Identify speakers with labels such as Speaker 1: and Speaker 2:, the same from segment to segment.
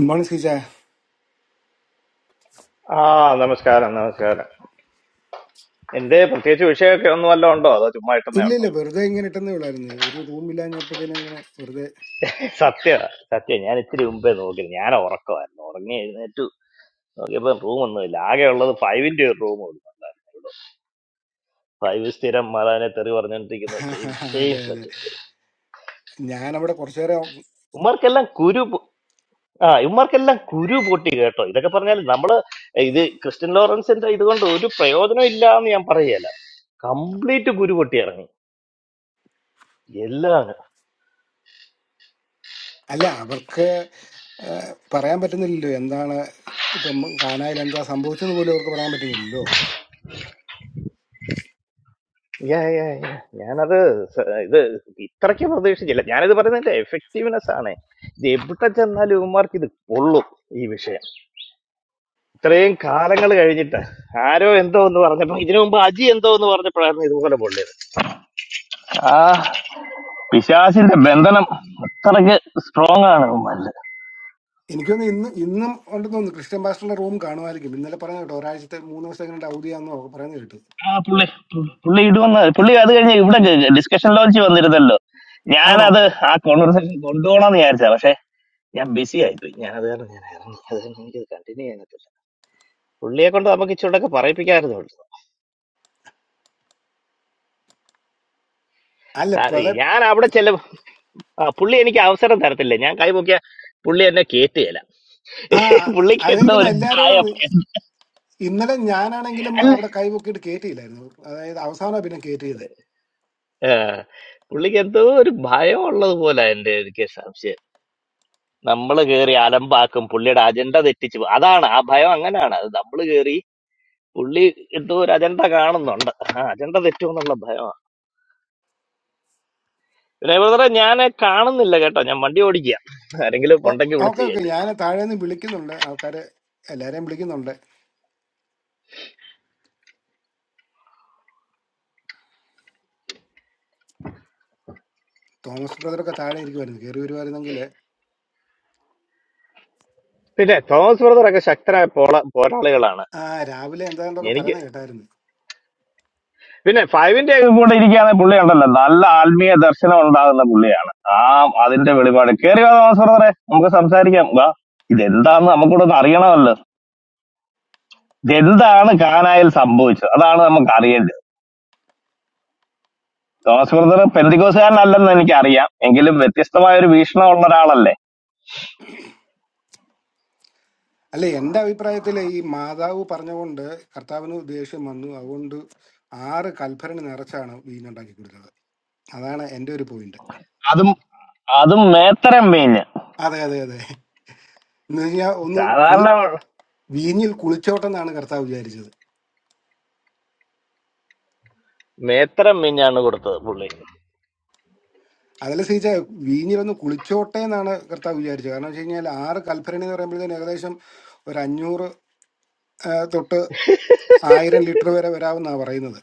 Speaker 1: എന്താണ് സീജ
Speaker 2: ആ നമസ്കാരം നമസ്കാരം എന്തേ പ്രത്യേകിച്ച് വിഷയമൊക്കെ ഒന്നും വല്ല ഉണ്ടോ അതോ ചുമ്മാ ഇട്ടുന്നേ
Speaker 1: ഇല്ല
Speaker 2: ഉണ്ടോ
Speaker 1: ഇല്ല വെറുതെ ഇങ്ങനെ ഇട്ടെന്നേ ഉള്ളായിരുന്നു ഒരു റൂമില്ലാഞ്ഞപ്പോഴത്തേനും അങ്ങനെ വെറുതെ
Speaker 2: സത്യം സത്യം ഞാൻ ഇത്തിരി മുമ്പേ നോക്കി ഞാൻ ഉറക്കമായിരുന്നു ഉറങ്ങി എഴുന്നേറ്റു നോക്കിയപ്പോ റൂം ഒന്നും ഇല്ല ആകെ ഉള്ളത് ഫൈവിന്റെ ഒരു റൂം ഫൈവ് സ്ഥിരം മാതാവിനെ തെറി പറഞ്ഞോണ്ടിരിക്കുന്ന സെയിം സെയിം
Speaker 1: അതെ അതെ
Speaker 2: സബ്ജക്ട്
Speaker 1: ഞാനവിടെ കുറച്ചു നേരം
Speaker 2: ഉമ്മാർക്കെല്ലാം കുരു പൊ- ആ ഇവന്മാർക്കെല്ലാം കുരു പൊട്ടി കേട്ടോ ഇതൊക്കെ പറഞ്ഞാൽ നമ്മള് ഇത് ക്രിസ്ത്യൻ ലോറൻസിന്റെ ഇതുകൊണ്ട് ഒരു പ്രയോജനം ഇല്ല എന്ന് ഞാൻ പറയുകയല്ല കംപ്ലീറ്റ് കുരു പൊട്ടി ഇറങ്ങി എല്ലാം
Speaker 1: അല്ല അവർക്ക് ആ, പറയാൻ പറ്റുന്നില്ലല്ലോ എന്താണ് ഇപ്പം കാനായിൽ എന്താ സംഭവിച്ചെന്ന് പോലും അവർക്ക് പറയാൻ പറ്റുന്നില്ലല്ലോ
Speaker 2: യാ യാ യാ ഞാനത് സ- ഇത് ഇത്രയ്ക്ക് പ്രതീക്ഷിച്ചില്ല ഞാനിത് പറയുന്നതിന്റെ എഫക്റ്റീവ്നെസ് ആണ് ഇത് എവിടെ ചെന്നാലും ഇവന്മാർക്ക് ഇത് കൊള്ളും ഈ വിഷയം ഇത്രയും കാലങ്ങൾ കഴിഞ്ഞിട്ട് ആരോ എന്തോ എന്ന് പറഞ്ഞപ്പോ ഇതിനു മുമ്പ് അജി എന്തോ എന്ന് പറഞ്ഞപ്പോഴായിരുന്നു ഇതുപോലെ പൊള്ളിയത് ആ പിശാസിന്റെ ബന്ധനം അത്രയ്ക്ക് സ്ട്രോങ് ആണ് ഉമ്മല്ല
Speaker 1: എനിക്കൊന്ന് ഇന്ന് ഇന്നും ഉണ്ടെന്ന് തോന്നുന്നു ക്രിസ്ത്യൻ പാസ്റ്ററിന്റെ റൂം കാണുമായിരിക്കും ഇന്നലെ പറഞ്ഞു കേട്ടോ ഒരാഴ്ചത്തെ മൂന്ന് ദിവസത്തെ കണ്ട് അവധിയാണെന്നോ പറയുന്നത് കേട്ടു
Speaker 2: ആ പുള്ളി പുള്ളി പുള്ളി ഇടുവെന്ന് പുള്ളി അത് കഴിഞ്ഞ് ഇവിടെ ഡിസ്കഷൻ ലോഞ്ച് വന്നിരുന്നല്ലോ
Speaker 1: ആണോ
Speaker 2: ഞാനത് ആ കോൺവെർസേഷൻ കൊണ്ടുപോകണമെന്ന് വിചാരിച്ചാ ഞാൻ ബിസി ആയിപ്പോയി ഞാൻ അത് കാരണം ഞാൻ ഇറങ്ങി അത് കാരണം എനിക്കത് കണ്ടിന്യൂ ചെയ്യാൻ പറ്റില്ല പുള്ളിയെ കൊണ്ട് നമുക്ക് ഇച്ചിരൂടെ പറയിപ്പിക്കാമായിരുന്നു
Speaker 1: അല്ല
Speaker 2: ആ,
Speaker 1: പ്രളയ
Speaker 2: ഞാൻ അവിടെ ചെല്ല ആ, പുള്ളി എനിക്ക് അവസരം തരത്തില്ല ഞാൻ കൈ പൊക്കിയ പുള്ളി എന്നെ കേറ്റുകയില്ല
Speaker 1: ആ
Speaker 2: പുള്ളിക്ക് എന്തോ
Speaker 1: അതെനിക്കൊന്ന്
Speaker 2: ഒരു ഭയം
Speaker 1: എല്ലാരോടും ഇന്നലെ ഞാനാണെങ്കിലും
Speaker 2: അല്ല
Speaker 1: അവിടെ കൈവൊക്കിയിട്ട് കയറ്റിയില്ലായിരുന്നു അതായത് അവസാനമാണ് പിന്നെ കയറ്റിയത്
Speaker 2: ആ, പുള്ളിക്ക് എന്തോ ഒരു ഭയം ഉള്ളത് പോലെ എന്റെ എനിക്ക് സംശയം നമ്മൾ കേറി അലമ്പാക്കും പുള്ളിയുടെ അജണ്ട തെറ്റിച്ചു പോകും. അതാണ് ആ ഭയം അങ്ങനെയാണ് അത് നമ്മൾ കേറി പുള്ളി എന്തോ ഒരു അജണ്ട കാണുന്നുണ്ട് ആ അജണ്ട തെറ്റുമെന്നുള്ള ഭയം പിന്നെ ബ്രദറെ ഞാൻ കാണുന്നില്ല കേട്ടോ ഞാൻ വണ്ടി ഓടിക്കുക ആരെങ്കിലും
Speaker 1: ഓ
Speaker 2: ഉണ്ടെങ്കിൽ വിളിച്ച്
Speaker 1: ഓക്കെ ഓക്കെ
Speaker 2: കയറ്റുക
Speaker 1: ഞാൻ താഴെ നിന്ന് വിളിക്കുന്നുണ്ട് ആൾക്കാരെ എല്ലാരെയും വിളിക്കുന്നുണ്ട് തോമസ് ബ്രദറൊക്കെ താഴെ ഇരിക്കുമായിരുന്നു കയറി വരുമായിരുന്നെങ്കിൽ
Speaker 2: പിന്നെ തോമസ് ബ്രദറൊക്കെ ശക്തരായ പോള പോരാളികളാണ്
Speaker 1: ആ രാവിലെ എന്താണ്ടൊക്കെ
Speaker 2: എനിക്ക്
Speaker 1: പറയുന്നത് കേട്ടായിരുന്നു
Speaker 2: പിന്നെ ഫൈവിന്റെ ഒക്കെ കൂടെ ഇരിക്കുകയാണെങ്കിൽ പുള്ളി ഉണ്ടല്ലോ നല്ല ആത്മീയ ദർശനം ഉണ്ടാകുന്ന പുള്ളിയാണ് ആ അതിന്റെ വെളിപാട് കേറി വാ തോമസ് ബ്രദറെ നമുക്ക് സംസാരിക്കാം വാ ഇതെന്താന്ന് നമുക്കൂടൊന്ന് അറിയണമല്ലോ ഇതെന്താണ് കാനായിൽ സംഭവിച്ചത് അതാണ് നമുക്ക് അറിയേണ്ടത് തോമസ് ബ്രദർ പെന്തികോസുകാരനല്ലെന്ന് എനിക്കറിയാം എങ്കിലും വ്യത്യസ്തമായ ഒരു വീക്ഷണമുള്ള ഒരാളല്ലേ
Speaker 1: അല്ല എൻ്റെ അഭിപ്രായത്തിൽ ഈ മാതാവ് പറഞ്ഞുകൊണ്ട് കർത്താവിന് ദേഷ്യം വന്നു അതുകൊണ്ട് ആറ് കൽഭരണി നിറച്ചാണ് വീഞ്ഞുണ്ടാക്കി കൊടുത്തത് അതാണ് എൻ്റെ ഒരു പോയിന്റ്
Speaker 2: അതും അതും മേത്തരം മീഞ്ഞ്
Speaker 1: അതെ അതെ അതെ എന്ന് കഴിഞ്ഞാൽ ഒന്ന് കുളി
Speaker 2: സാധാരണ
Speaker 1: വീഞ്ഞിൽ കുളിച്ചോട്ടെ എന്നാണ് കർത്താവ് വിചാരിച്ചത്
Speaker 2: മേത്തരം മീഞ്ഞാണ് കൊടുത്തത് പുള്ളി
Speaker 1: അതല്ല സീച്ച വീഞ്ഞിലൊന്ന് കുളിച്ചോട്ടെ എന്നാണ് കർത്താവ് വിചാരിച്ചത് കാരണം വെച്ച് കഴിഞ്ഞാൽ ആറ് കൽഭരണി എന്ന് പറയുമ്പോഴത്തേന് ഏകദേശം ഒരു അഞ്ഞൂറ് ആ, തൊട്ട് ആയിരം ലിറ്റർ വരെ വരാമെന്നാണ് പറയുന്നത്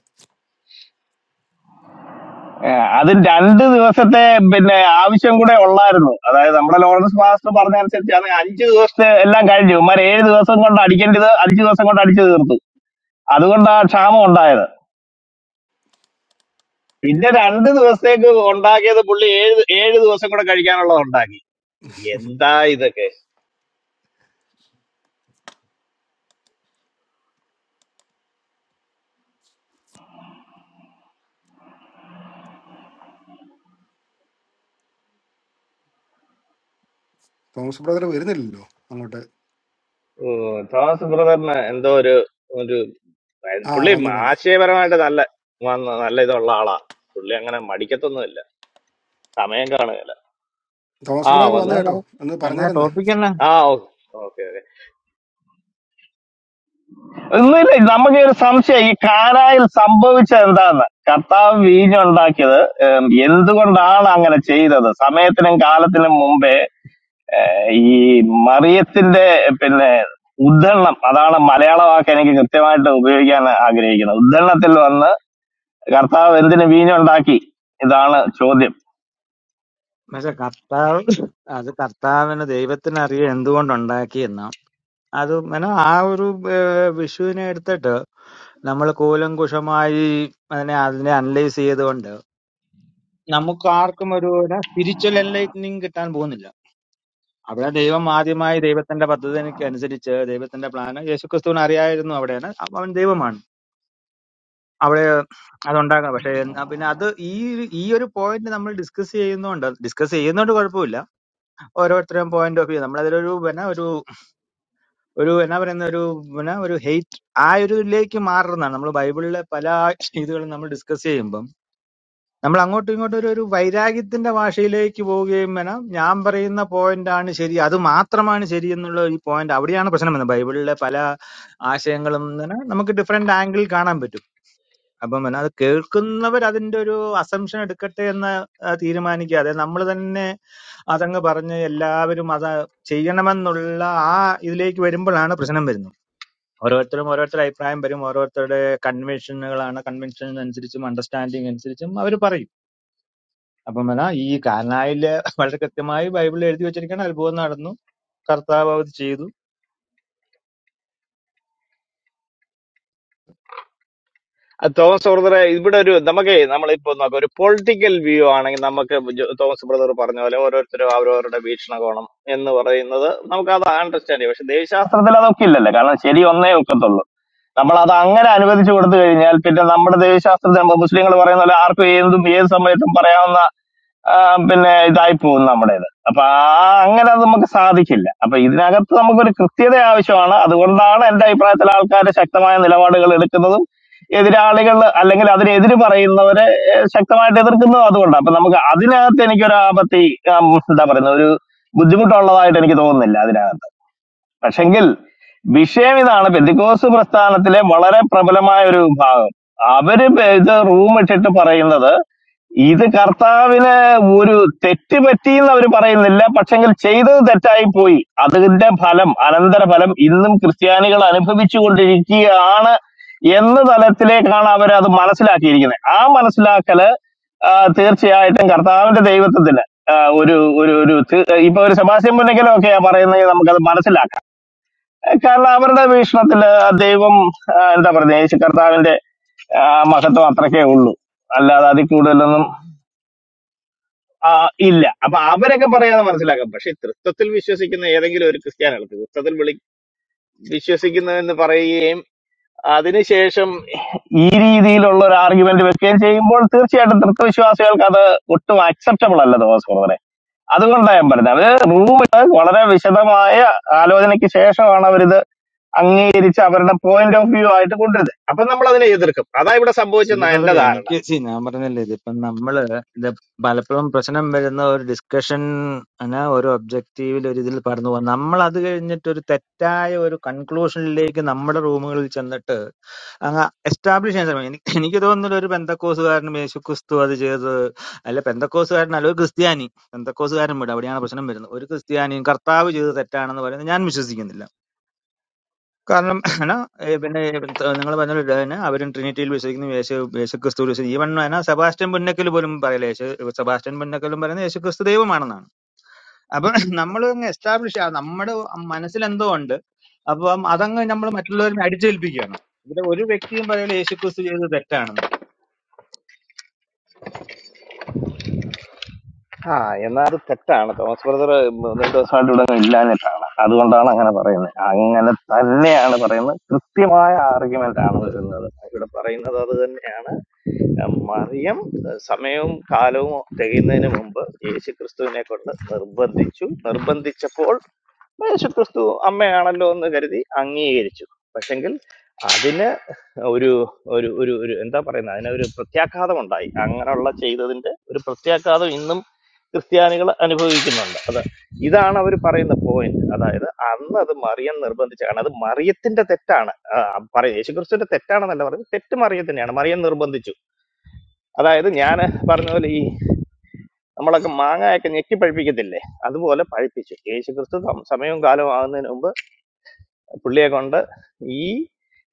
Speaker 2: ഏഹ് അത് രണ്ട് ദിവസത്തെ പിന്നെ ആവശ്യം കൂടെ ഉള്ളായിരുന്നു അതായത് നമ്മുടെ ലോറൻസ് മാസ്റ്റർ പറഞ്ഞ അനുസരിച്ചാണ് അഞ്ച് ദിവസത്തെ എല്ലാം കഴിഞ്ഞു ഇമാർ ഏഴ് ദിവസം കൊണ്ട് അടിക്കേണ്ടത് അഞ്ച് ദിവസം കൊണ്ട് അടിച്ചു തീർത്തു അതുകൊണ്ട് ആ ക്ഷാമം ഉണ്ടായത് പിന്നെ രണ്ട് ദിവസത്തേക്ക് ഉണ്ടാക്കിയത് പുള്ളി ഏഴ് ഏഴ് ദിവസം കൂടെ കഴിക്കാനുള്ളത് ഉണ്ടാക്കി എന്താ ഇതൊക്കെ
Speaker 1: തോമസ് ബ്രദർ വരുന്നില്ലല്ലോ അങ്ങോട്ട്
Speaker 2: ഉം, തോമസ് ബ്രദറിന് എന്തോ ഒരു ഒരു
Speaker 1: ആ
Speaker 2: പുള്ളി
Speaker 1: വന്നു വന്നു
Speaker 2: ആശയപരമായിട്ട് നല്ല വന്ന- നല്ല ഇതുള്ള ആളാ പുള്ളി അങ്ങനെ മടിക്കത്തൊന്നുമില്ല സമയം കാണുകയില്ല
Speaker 1: തോമസ്
Speaker 2: ആ
Speaker 1: ബ്രദർ
Speaker 2: വന്നു
Speaker 1: വന്നു
Speaker 3: എന്നാ
Speaker 2: വന്നു
Speaker 3: പറ
Speaker 1: കേട്ടോ ഒന്ന്
Speaker 3: എന്നാ
Speaker 1: പറഞ്ഞിരുന്ന
Speaker 3: ടോപ്പിക് എന്നാ
Speaker 2: ആ ഓക്കെ ഓക്കെ ഒന്നുമില്ല നമുക്ക് ഒരു സംശയം ഈ കാനായിൽ സംഭവിച്ചത് എന്താന്ന് കർത്താവ് വീഞ്ഞുണ്ടാക്കിയത് ഉം, എന്തുകൊണ്ടാണ് അങ്ങനെ ചെയ്തത് സമയത്തിനും കാലത്തിനും മുമ്പേ ഏഹ്, ഈ മറിയത്തിന്റെ പിന്നെ ഉദ്ധരണം അതാണ് മലയാള വാക്ക് എനിക്ക് കൃത്യമായിട്ട് ഉപയോഗിക്കാൻ ആഗ്രഹിക്കുന്നത് ഉദ്ധരണത്തിൽ വന്ന് കർത്താവ് എന്തിന് വീഞ്ഞുണ്ടാക്കി ഇതാണ് ചോദ്യം
Speaker 3: എന്നുവെച്ചാ കർത്താവ് അത് കർത്താവിന് ദൈവത്തിന് അറിയാം എന്തുകൊണ്ടുണ്ടാക്കിയെന്ന് അത് എന്നാ ആ ഒരു ഏഹ്, വിഷുവിനെ എടുത്തിട്ട് നമ്മൾ കൂലങ്കുഷമായി അതിനെ അതിനെ അനലൈസ് ചെയ്തുകൊണ്ട് നമുക്ക് ആർക്കും ഒരു സ്പിരിച്വൽ എൻലൈറ്റനിങ് കിട്ടാൻ പോകുന്നില്ല അവിടെ ദൈവം ആദ്യമായി ദൈവത്തിന്റെ പദ്ധതിക്ക് അനുസരിച്ച് ദൈവത്തിന്റെ പ്ലാൻ യേശുക്രിസ്തുവിന് അറിയായിരുന്നു അവിടെയാണ് അവ- അവൻ ദൈവമാണ് അവിടെ അതുണ്ടാകാം പക്ഷെ എന്നാ പിന്നെ അത് ഈ ഈ ഒരു പോയിന്റ് നമ്മൾ ഡിസ്കസ് ചെയ്യുന്നോണ്ട് ഡിസ്കസ് ചെയ്യുന്നോണ്ട് കുഴപ്പമില്ല ഓരോരുത്തരും പോയിന്റ് ഓഫ് വ്യൂ നമ്മളതിലൊരു പിന്നെ ഒരു ഒരു എന്നാ പറയുന്ന ഒരു പിന്നെ ഒരു ഹെയ്റ്റ് ആ ഒരു ഇതിലേക്ക് മാറുന്നതാണ് നമ്മൾ ബൈബിളിലെ പല ഇതുകളും നമ്മൾ ഡിസ്കസ് ചെയ്യുമ്പം നമ്മൾ അങ്ങോട്ടും ഇങ്ങോട്ടും ഒരു ഒരു വൈരാഗ്യത്തിന്റെ ഭാഷയിലേക്ക് പോവുകയും വേണം ഞാൻ പറയുന്ന പോയിന്റ് ആണ് ശരി അത് മാത്രമാണ് ശരി എന്നുള്ള ഈ പോയിന്റ് അവിടെയാണ് പ്രശ്നം വരുന്നത് ബൈബിളിലെ പല ആശയങ്ങളും ഇങ്ങനെ നമുക്ക് ഡിഫറെന്റ് ആംഗിളിൽ കാണാൻ പറ്റും അപ്പം പിന്നെ അത് കേൾക്കുന്നവർ അതിന്റെ ഒരു അസംഷൻ എടുക്കട്ടെ എന്ന് ആ, തീരുമാനിക്കാതെ നമ്മൾ തന്നെ അതങ്ങ് പറഞ്ഞ് എല്ലാവരും അത് ചെയ്യണമെന്നുള്ള ആ ഇതിലേക്ക് വരുമ്പോഴാണ് പ്രശ്നം വരുന്നത് ഓരോരുത്തരും ഓരോരുത്തരുടെ അഭിപ്രായം വരും ഓരോരുത്തരുടെ കൺവെൻഷനുകളാണ് കൺവെൻഷൻ അനുസരിച്ചും അണ്ടർസ്റ്റാൻഡിങ് അനുസരിച്ചും അവർ പറയും അപ്പം എന്നാ ഈ കാനായില് വളരെ കൃത്യമായി ബൈബിളിൽ എഴുതി വെച്ചിരിക്കണം അത്ഭുതം നടന്നു കർത്താവ് അത് ചെയ്തു
Speaker 2: ആ, തോമസ് ബ്രദറെ ഇവിടെ ഒരു നമുക്ക് നമ്മളിപ്പോ നോക്കാം ഒരു പൊളിറ്റിക്കൽ വ്യൂ ആണെങ്കിൽ നമുക്ക് ജോ- തോമസ് ബ്രദർ പറഞ്ഞ പോലെ ഓരോരുത്തരും അവരവരുടെ വീക്ഷണകോണം എന്ന് പറയുന്നത് നമുക്ക് അത് അണ്ടർസ്റ്റാൻഡ് ചെയ്യാം പക്ഷെ ദേവശാസ്ത്രത്തിൽ അതൊക്കെ ഇല്ലല്ലോ കാരണം ശരി ഒന്നേ ഒക്കത്തുള്ളൂ നമ്മൾ അത് അങ്ങനെ അനുവദിച്ചു കൊടുത്തു കഴിഞ്ഞാൽ പിന്നെ നമ്മുടെ ദേവശാസ്ത്രത്തിൽ മുസ്ലിങ്ങൾ പറയുന്ന പോലെ ആർക്കും ഏതും ഏത് സമയത്തും പറയാവുന്ന ആ, പിന്നെ ഇതായി പോകും നമ്മുടേത് അപ്പൊ ആ അങ്ങനെ അത് നമുക്ക് സാധിക്കില്ല അപ്പൊ ഇതിനകത്ത് നമുക്കൊരു കൃത്യത ആവശ്യമാണ് അതുകൊണ്ടാണ് എന്റെ അഭിപ്രായത്തിൽ ആൾക്കാർ ശക്തമായ നിലപാടുകൾ എടുക്കുന്നതും എതിരാളികൾ അല്ലെങ്കിൽ അതിനെതിര് പറയുന്നവരെ ഏഹ്, ശക്തമായിട്ട് എതിർക്കുന്നതും അതുകൊണ്ടാണ് അപ്പൊ നമുക്ക് അതിനകത്ത് എനിക്കൊരു ആപത്തി ഉം, എന്താ പറയുന്നത് ഒരു ബുദ്ധിമുട്ടുള്ളതായിട്ട് എനിക്ക് തോന്നുന്നില്ല അതിനകത്ത് പക്ഷെങ്കിൽ വിഷയം ഇതാണ് പെന്തിക്കോസ് പ്രസ്ഥാനത്തിലെ വളരെ പ്രബലമായ ഒരു ഭാഗം അവര് പെ- ഇത് റൂം ഇട്ടിട്ട് പറയുന്നത് ഇത് കർത്താവിന് ഒരു തെറ്റ് പറ്റിയെന്ന് അവർ പറയുന്നില്ല പക്ഷെങ്കിൽ ചെയ്തത് തെറ്റായി പോയി അതിന്റെ ഫലം അനന്തര ഫലം ഇന്നും ക്രിസ്ത്യാനികൾ അനുഭവിച്ചു കൊണ്ടിരിക്കുകയാണ് എന്ന തലത്തിലേക്കാണ് അവർ അത് മനസ്സിലാക്കിയിരിക്കുന്നത് ആ മനസ്സിലാക്കല് ആ, തീർച്ചയായിട്ടും കർത്താവിന്റെ ദൈവത്വത്തിന് ആ, ഒരു ഒരു ഒരു തി- ഇപ്പൊ ഒരു സെബാസ്റ്റ്യൻ പുന്നക്കലൊക്കെയാ പറയുന്നെങ്കിൽ നമുക്കത് മനസ്സിലാക്കാം കാരണം അവരുടെ വീക്ഷണത്തില് ദൈവം ആ, എന്താ പറയുക യേശു കർത്താവിന്റെ ആ, മഹത്വം അത്രക്കേ ഉള്ളൂ അല്ലാതെ അതിൽ കൂടുതലൊന്നും ആ, ഇല്ല അപ്പൊ അവരൊക്കെ പറയാതെ മനസ്സിലാക്കാം പക്ഷെ തൃത്വത്തിൽ വിശ്വസിക്കുന്ന ഏതെങ്കിലും ഒരു ക്രിസ്ത്യാനികൾക്ക് തൃത്വത്തിൽ വിളി വിശ്വസിക്കുന്നതെന്ന് പറയുകയും അതിനുശേഷം ഈ രീതിയിലുള്ള ഒരു ആർഗ്യുമെന്റ് വെക്കുകയും ചെയ്യുമ്പോൾ തീർച്ചയായിട്ടും തൃത്വവിശ്വാസികൾക്ക് അത് ഒട്ടും അക്സെപ്റ്റബിൾ അല്ല തോമസ് ബ്രദറെ അതുകൊണ്ടാണ് ഞാൻ പറഞ്ഞത് അവര് റൂമിൽ വളരെ വിശദമായ ആലോചനയ്ക്ക് ശേഷമാണ് അവരിത് അംഗീകരിച്ച് അവരുടെ പോയിന്റ് ഓഫ് വ്യൂ ആയിട്ട് കൊണ്ടുവരുന്നത് അപ്പൊ നമ്മൾ അതിനെ എതിർക്കും അതാ ഇവിടെ
Speaker 3: ശരി
Speaker 2: സംഭവിച്ചെന്ന എന്റെ
Speaker 3: ബ്രദറെ
Speaker 2: ധാരണ
Speaker 3: എനിക്ക് see, ഞാൻ പറഞ്ഞില്ലേ ഇതിപ്പം നമ്മള് ഇത് പലപ്പോഴും പ്രശ്നം വരുന്ന ഒരു ഡിസ്കഷൻ ആണ്, ഒരു ഒബ്ജക്റ്റീവിൽ ഒരു ഇതിൽ പറഞ്ഞു പോകും നമ്മൾ അത് കഴിഞ്ഞിട്ട് ഒരു തെറ്റായ ഒരു കൺക്ലൂഷനിലേക്ക് നമ്മുടെ റൂമുകളിൽ ചെന്നിട്ട് അങ്ങ് എസ്റ്റാബ്ലിഷ് ചെയ്യാൻ ശ്രമിക്കും എനിക്ക് എനിക്ക് തോന്നുന്നില്ല ഒരു പെന്തക്കോസുകാരനും യേശു ക്രിസ്തു അത് ചെയ്തത് അല്ല പെന്തക്കോസുകാരനല്ല ഒരു ക്രിസ്ത്യാനി പെന്തക്കോസുകാരൻ വിടും അവിടെയാണ് പ്രശ്നം വരുന്നത് ഒരു ക്രിസ്ത്യാനിയും കർത്താവ് ചെയ്തത് തെറ്റാണെന്ന് പറയുന്നത് ഞാൻ വിശ്വസിക്കുന്നില്ല കാരണം എന്നാ, ഏ, പിന്നെ നിങ്ങൾ പറഞ്ഞ പോലെ തന്നെ അവരും ട്രിനിറ്റിയിൽ വിശ്വസിക്കുന്നു യേശു യേശു ക്രിസ്തു ഈവൻ എന്നാ സെബാസ്റ്റ്യൻ പുന്നക്കൽ പോലും പറയില്ല യേശു സെബാസ്റ്റ്യൻ പുന്നക്കലും പറയുന്നത് യേശു ക്രിസ്തു ദൈവമാണെന്നാണ് അപ്പൊ നമ്മൾ എസ്റ്റാബ്ലിഷ് നമ്മുടെ മനസ്സിൽ എന്തോ ഉണ്ട് അപ്പം അതങ്ങ് നമ്മൾ മറ്റുള്ളവരിൽ അടിച്ചേൽപ്പിക്കുകയാണ് ഇവിടെ ഒരു വ്യക്തിയും പറയില്ല യേശു ക്രിസ്തു ചെയ്തത് തെറ്റാണെന്ന്
Speaker 2: ആ എന്നാ അത് തെറ്റാണ് തോമസ് ബ്രദർ മൂന്ന് ദിവസമായിട്ട് ഇവിടെ ഇല്ലാഞ്ഞിട്ടാണ് അതുകൊണ്ടാണ് അങ്ങനെ പറയുന്നത് അങ്ങനെ തന്നെയാണ് പറയുന്നത് കൃത്യമായ ആർഗ്യുമെന്റ് ആണ് വരുന്നത് ഇവിടെ പറയുന്നത് അത് തന്നെയാണ് മറിയം ഏഹ് സമയവും കാലവും തികയുന്നതിന് മുമ്പ് യേശു ക്രിസ്തുവിനെ കൊണ്ട് നിർബന്ധിച്ചു നിർബന്ധിച്ചപ്പോൾ യേശു ക്രിസ്തു അമ്മയാണല്ലോ എന്ന് കരുതി അംഗീകരിച്ചു പക്ഷെങ്കിൽ അതിന് ഒരു ഒരു ഒരു ഒരു എന്താ പറയുന്നത് അതിനൊരു പ്രത്യാഘാതം ഉണ്ടായി അങ്ങനെയുള്ള ചെയ്തതിന്റെ ഒരു പ്രത്യാഘാതം ഇന്നും ക്രിസ്ത്യാനികൾ അനുഭവിക്കുന്നുണ്ട് അത് ഇതാണ് അവർ പറയുന്ന പോയിന്റ് അതായത് അന്ന് അത് മറിയം നിർബന്ധിച്ചാണ് അത് മറിയത്തിന്റെ തെറ്റാണ് ആ, പറയ യേശുക്രിസ്തുവിന്റെ തെറ്റാണെന്നല്ല പറയുന്നത് തെറ്റ് മറിയത്തിന്റെയാണ് മറിയം നിർബന്ധിച്ചു അതായത് ഞാൻ പറഞ്ഞ പോലെ ഈ നമ്മളൊക്കെ മാങ്ങയൊക്കെ ഞെക്കി പഴിപ്പിക്കത്തില്ലേ അതുപോലെ പഴിപ്പിച്ചു യേശുക്രിസ്തു സമ- സമയവും കാലവും ആകുന്നതിന് മുമ്പ് പുള്ളിയെ കൊണ്ട് ഈ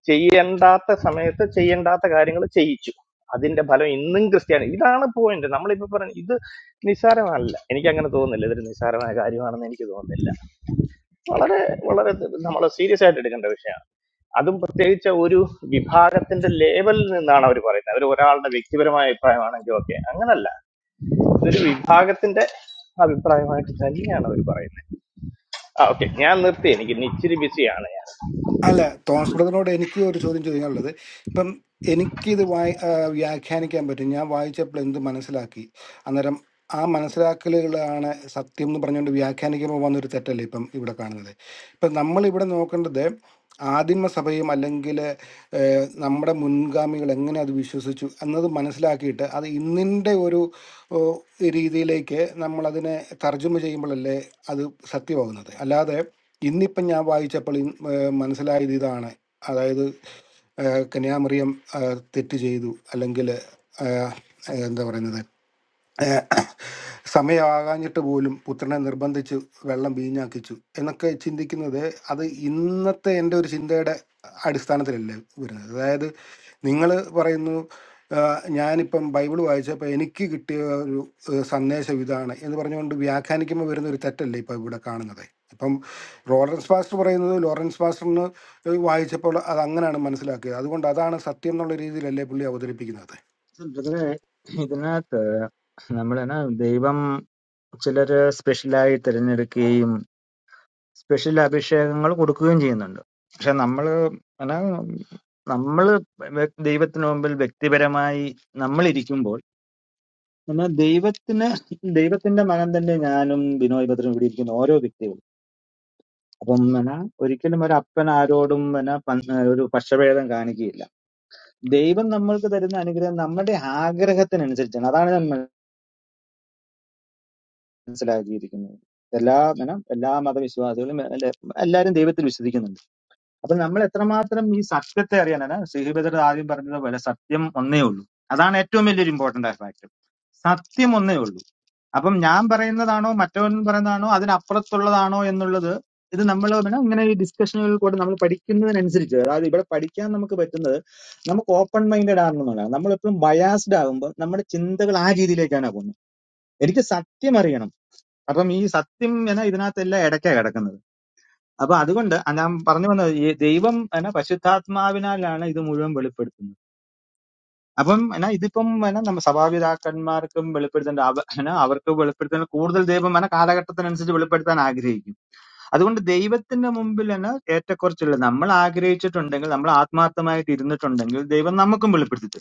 Speaker 2: ചെയ്യേണ്ടാത്ത സമയത്ത് ചെയ്യേണ്ടാത്ത കാര്യങ്ങൾ ചെയ്യിച്ചു അതിന്റെ ഫലം ഇന്നും ക്രിസ്ത്യാനി ഇതാണ് പോയിന്റ് നമ്മളിപ്പോ പറഞ്ഞു ഇത് നിസ്സാരമല്ല എനിക്ക് അങ്ങനെ തോന്നുന്നില്ല ഇതൊരു നിസ്സാരമായ കാര്യമാണെന്ന് എനിക്ക് തോന്നുന്നില്ല വളരെ വളരെ നമ്മൾ സീരിയസ് ആയിട്ട് എടുക്കേണ്ട വിഷയമാണ് അതും പ്രത്യേകിച്ച് ഒരു വിഭാഗത്തിന്റെ ലേബലിൽ നിന്നാണ് അവർ പറയുന്നത് അവർ ഒരാളുടെ വ്യക്തിപരമായ അഭിപ്രായമാണെങ്കിൽ ഓക്കെ അങ്ങനല്ല ഇതൊരു വിഭാഗത്തിന്റെ അഭിപ്രായമായിട്ട് തന്നെയാണ് അവർ പറയുന്നത് ആ ഓക്കെ ഞാൻ നിർത്തി എനിക്ക് ഇന്ന് ഇച്ചിരി ബിസിയാണ് ഞാൻ
Speaker 1: അല്ല തോമസ് ബ്രദറിനോട് എനിക്ക് ഒരു ചോദ്യം ചോദിക്കാനുള്ളത് ഇപ്പം എനിക്കിത് വായി ആ, വ്യാഖ്യാനിക്കാൻ പറ്റും ഞാൻ വായിച്ചപ്പോൾ എന്ത് മനസ്സിലാക്കി അന്നേരം ആ മനസ്സിലാക്കലുകളാണ് സത്യം എന്ന് പറഞ്ഞുകൊണ്ട് വ്യാഖ്യാനിക്കുമ്പോൾ വന്നൊരു തെറ്റല്ലേ ഇപ്പം ഇവിടെ കാണുന്നത് ഇപ്പം നമ്മൾ ഇവിടെ നോക്കേണ്ടത് ആദിമ സഭയും അല്ലെങ്കിൽ ഏഹ് നമ്മുടെ മുൻഗാമികൾ എങ്ങനെ അത് വിശ്വസിച്ചു എന്നത് മനസ്സിലാക്കിയിട്ട് അത് ഇന്നിൻ്റെ ഒരു ഓ, രീതിയിലേക്ക് നമ്മളതിനെ തർജ്ജമ ചെയ്യുമ്പോഴല്ലേ അത് സത്യമാകുന്നത് അല്ലാതെ ഇന്നിപ്പം ഞാൻ വായിച്ചപ്പോൾ ഇൻ- ഏഹ് മനസ്സിലായത് ഇതാണ് അതായത് ഏഹ് കന്യാമറിയം ഏഹ് തെറ്റ് ചെയ്തു അല്ലെങ്കിൽ ഏഹ് എന്താ പറയുന്നത് ഏഹ് സമയമാകാഞ്ഞിട്ട് പോലും പുത്രനെ നിർബന്ധിച്ച് വെള്ളം വീഞ്ഞാക്കിച്ചു എന്നൊക്കെ ചിന്തിക്കുന്നത് അത് ഇന്നത്തെ എൻ്റെ ഒരു ചിന്തയുടെ അടിസ്ഥാനത്തിലല്ലേ വരുന്നത് അതായത് നിങ്ങൾ പറയുന്നു ആഹ് ഞാനിപ്പം ബൈബിൾ വായിച്ചപ്പോൾ എനിക്ക് കിട്ടിയ ഒരു ഏഹ് സന്ദേശം ഇതാണ് എന്ന് പറഞ്ഞുകൊണ്ട് വ്യാഖ്യാനിക്കുമ്പോൾ വരുന്ന ഒരു തെറ്റല്ലേ ഇപ്പം ഇവിടെ കാണുന്നത് ഇപ്പം ലോറൻസ് പാസ്റ്റർ പറയുന്നത് ലോറൻസ് പാസ്റ്ററിന് വായിച്ചപ്പോൾ അത് അങ്ങനെയാണ് മനസ്സിലാക്കിയത് അതുകൊണ്ട് അതാണ് സത്യം എന്നുള്ള രീതിയിലല്ലേ പുള്ളി അവതരിപ്പിക്കുന്നത്
Speaker 3: ബ്രദറെ ഇതിനകത്ത് നമ്മളെന്നാ ദൈവം ചിലര് സ്പെഷ്യലായി തിരഞ്ഞെടുക്കുകയും സ്പെഷ്യൽ അഭിഷേകങ്ങൾ കൊടുക്കുകയും ചെയ്യുന്നുണ്ട് പക്ഷെ നമ്മള് എന്നാ നമ്മള് വ്യ- ദൈവത്തിന് മുമ്പിൽ വ്യക്തിപരമായി നമ്മൾ ഇരിക്കുമ്പോൾ എന്നാൽ ദൈവത്തിന് ദൈവത്തിന്റെ മകൻ തന്നെ ഞാനും ബിനോയ് ഭദ്രനും ഇവിടെ ഇരിക്കുന്ന ഓരോ വ്യക്തികളും അപ്പം പിന്നെ ഒരിക്കലും ഒരു അപ്പൻ ആരോടും പിന്നെ പൻ- ഒരു പക്ഷഭേദം കാണിക്കുകയില്ല ദൈവം നമ്മൾക്ക് തരുന്ന അനുഗ്രഹം നമ്മുടെ ആഗ്രഹത്തിനനുസരിച്ചാണ് അതാണ് ഞാൻ മനസ്സിലാക്കിയിരിക്കുന്നത് എല്ലാ പിന്നെ എല്ലാ മതവിശ്വാസികളും എല്ലാ- എല്ലാവരും ദൈവത്തിൽ വിശ്വസിക്കുന്നുണ്ട് അപ്പൊ നമ്മൾ എത്രമാത്രം ഈ സത്യത്തെ അറിയാനാണ് ശ്രീഹിബദർ ആദ്യം പറഞ്ഞതുപോലെ സത്യം ഒന്നേ ഉള്ളൂ അതാണ് ഏറ്റവും വലിയൊരു ഇമ്പോർട്ടന്റ് ആയ ഫാക്ടർ സത്യം ഒന്നേ ഉള്ളൂ അപ്പം ഞാൻ പറയുന്നതാണോ മറ്റവൻ പറയുന്നതാണോ അതിനപ്പുറത്തുള്ളതാണോ എന്നുള്ളത് ഇത് നമ്മൾ പിന്നെ ഇങ്ങനെ ഈ ഡിസ്കഷനുകളിൽ കൂടെ നമ്മൾ പഠിക്കുന്നതിനനുസരിച്ച് അതായത് ഇവിടെ പഠിക്കാൻ നമുക്ക് പറ്റുന്നത് നമുക്ക് ഓപ്പൺ മൈൻഡഡ് ആകണമെന്നുള്ളതാണ് നമ്മൾ എപ്പോഴും ബയാസ്ഡ് ആകുമ്പോൾ നമ്മുടെ ചിന്തകൾ ആ രീതിയിലേക്കാണ് പോകുന്നത് എനിക്ക് സത്യം അറിയണം അപ്പം ഈ സത്യം എന്ന ഇതിനകത്തെല്ലാം ഇടയ്ക്കാണ് കിടക്കുന്നത് അപ്പൊ അതുകൊണ്ട് ഞാൻ പറഞ്ഞു വന്നത് ഈ ദൈവം എന്ന പരിശുദ്ധാത്മാവിനാലാണ് ഇത് മുഴുവൻ വെളിപ്പെടുത്തുന്നത് അപ്പം എന്നാ ഇതിപ്പം എന്നാ നമ്മ സഭാപിതാക്കന്മാർക്കും വെളിപ്പെടുത്തേണ്ട അവ- എന്നാ അവർക്ക് വെളിപ്പെടുത്തേണ്ട കൂടുതൽ ദൈവം എന്നാ കാലഘട്ടത്തിനനുസരിച്ച് വെളിപ്പെടുത്താൻ ആഗ്രഹിക്കും അതുകൊണ്ട് ദൈവത്തിന്റെ മുമ്പിൽ എന്നാ ഏറ്റക്കുറച്ചില്ല നമ്മൾ ആഗ്രഹിച്ചിട്ടുണ്ടെങ്കിൽ നമ്മൾ ആത്മാർത്ഥമായിട്ട് ഇരുന്നിട്ടുണ്ടെങ്കിൽ ദൈവം നമുക്കും വെളിപ്പെടുത്തി തരും.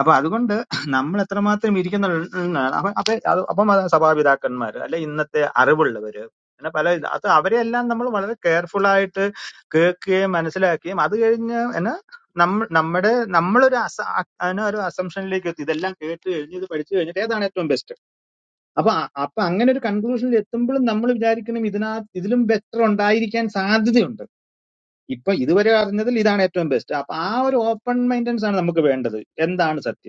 Speaker 3: അപ്പൊ അതുകൊണ്ട് നമ്മൾ എത്രമാത്രം ഇരിക്കുന്നുണ്ടാണ് അപ്പൊ അപ്പൊ അത് അപ്പം അത് സഭാപിതാക്കന്മാർ അല്ലെ ഇന്നത്തെ അറിവുള്ളവര് പിന്നെ പല ഇത് അത് അവരെയെല്ലാം നമ്മൾ വളരെ കെയർഫുൾ ആയിട്ട് കേൾക്കുകയും മനസ്സിലാക്കുകയും അത് കഴിഞ്ഞ് എന്നാ നമ്മ നമ്മുടെ നമ്മളൊരു അസ അ- എന്നാ ഒരു അസംഷനിലേക്ക് എത്തി ഇതെല്ലാം കേട്ട് കഴിഞ്ഞ് ഇത് പഠിച്ചു കഴിഞ്ഞിട്ട് ഏതാണ് ഏറ്റവും ബെസ്റ്റ് അപ്പൊ അ- അപ്പൊ അങ്ങനെ ഒരു കൺക്ലൂഷനിൽ എത്തുമ്പോഴും നമ്മൾ വിചാരിക്കണം ഇതിനകത്ത് ഇതിലും ബെറ്റർ ഉണ്ടായിരിക്കാൻ സാധ്യതയുണ്ട് ഇപ്പൊ ഇതുവരെ അറിഞ്ഞതിൽ ഇതാണ് ഏറ്റവും ബെസ്റ്റ് അപ്പൊ ആ ഒരു ഓപ്പൺ മൈൻഡൻസ് ആണ് നമുക്ക് വേണ്ടത് എന്താണ് സത്യം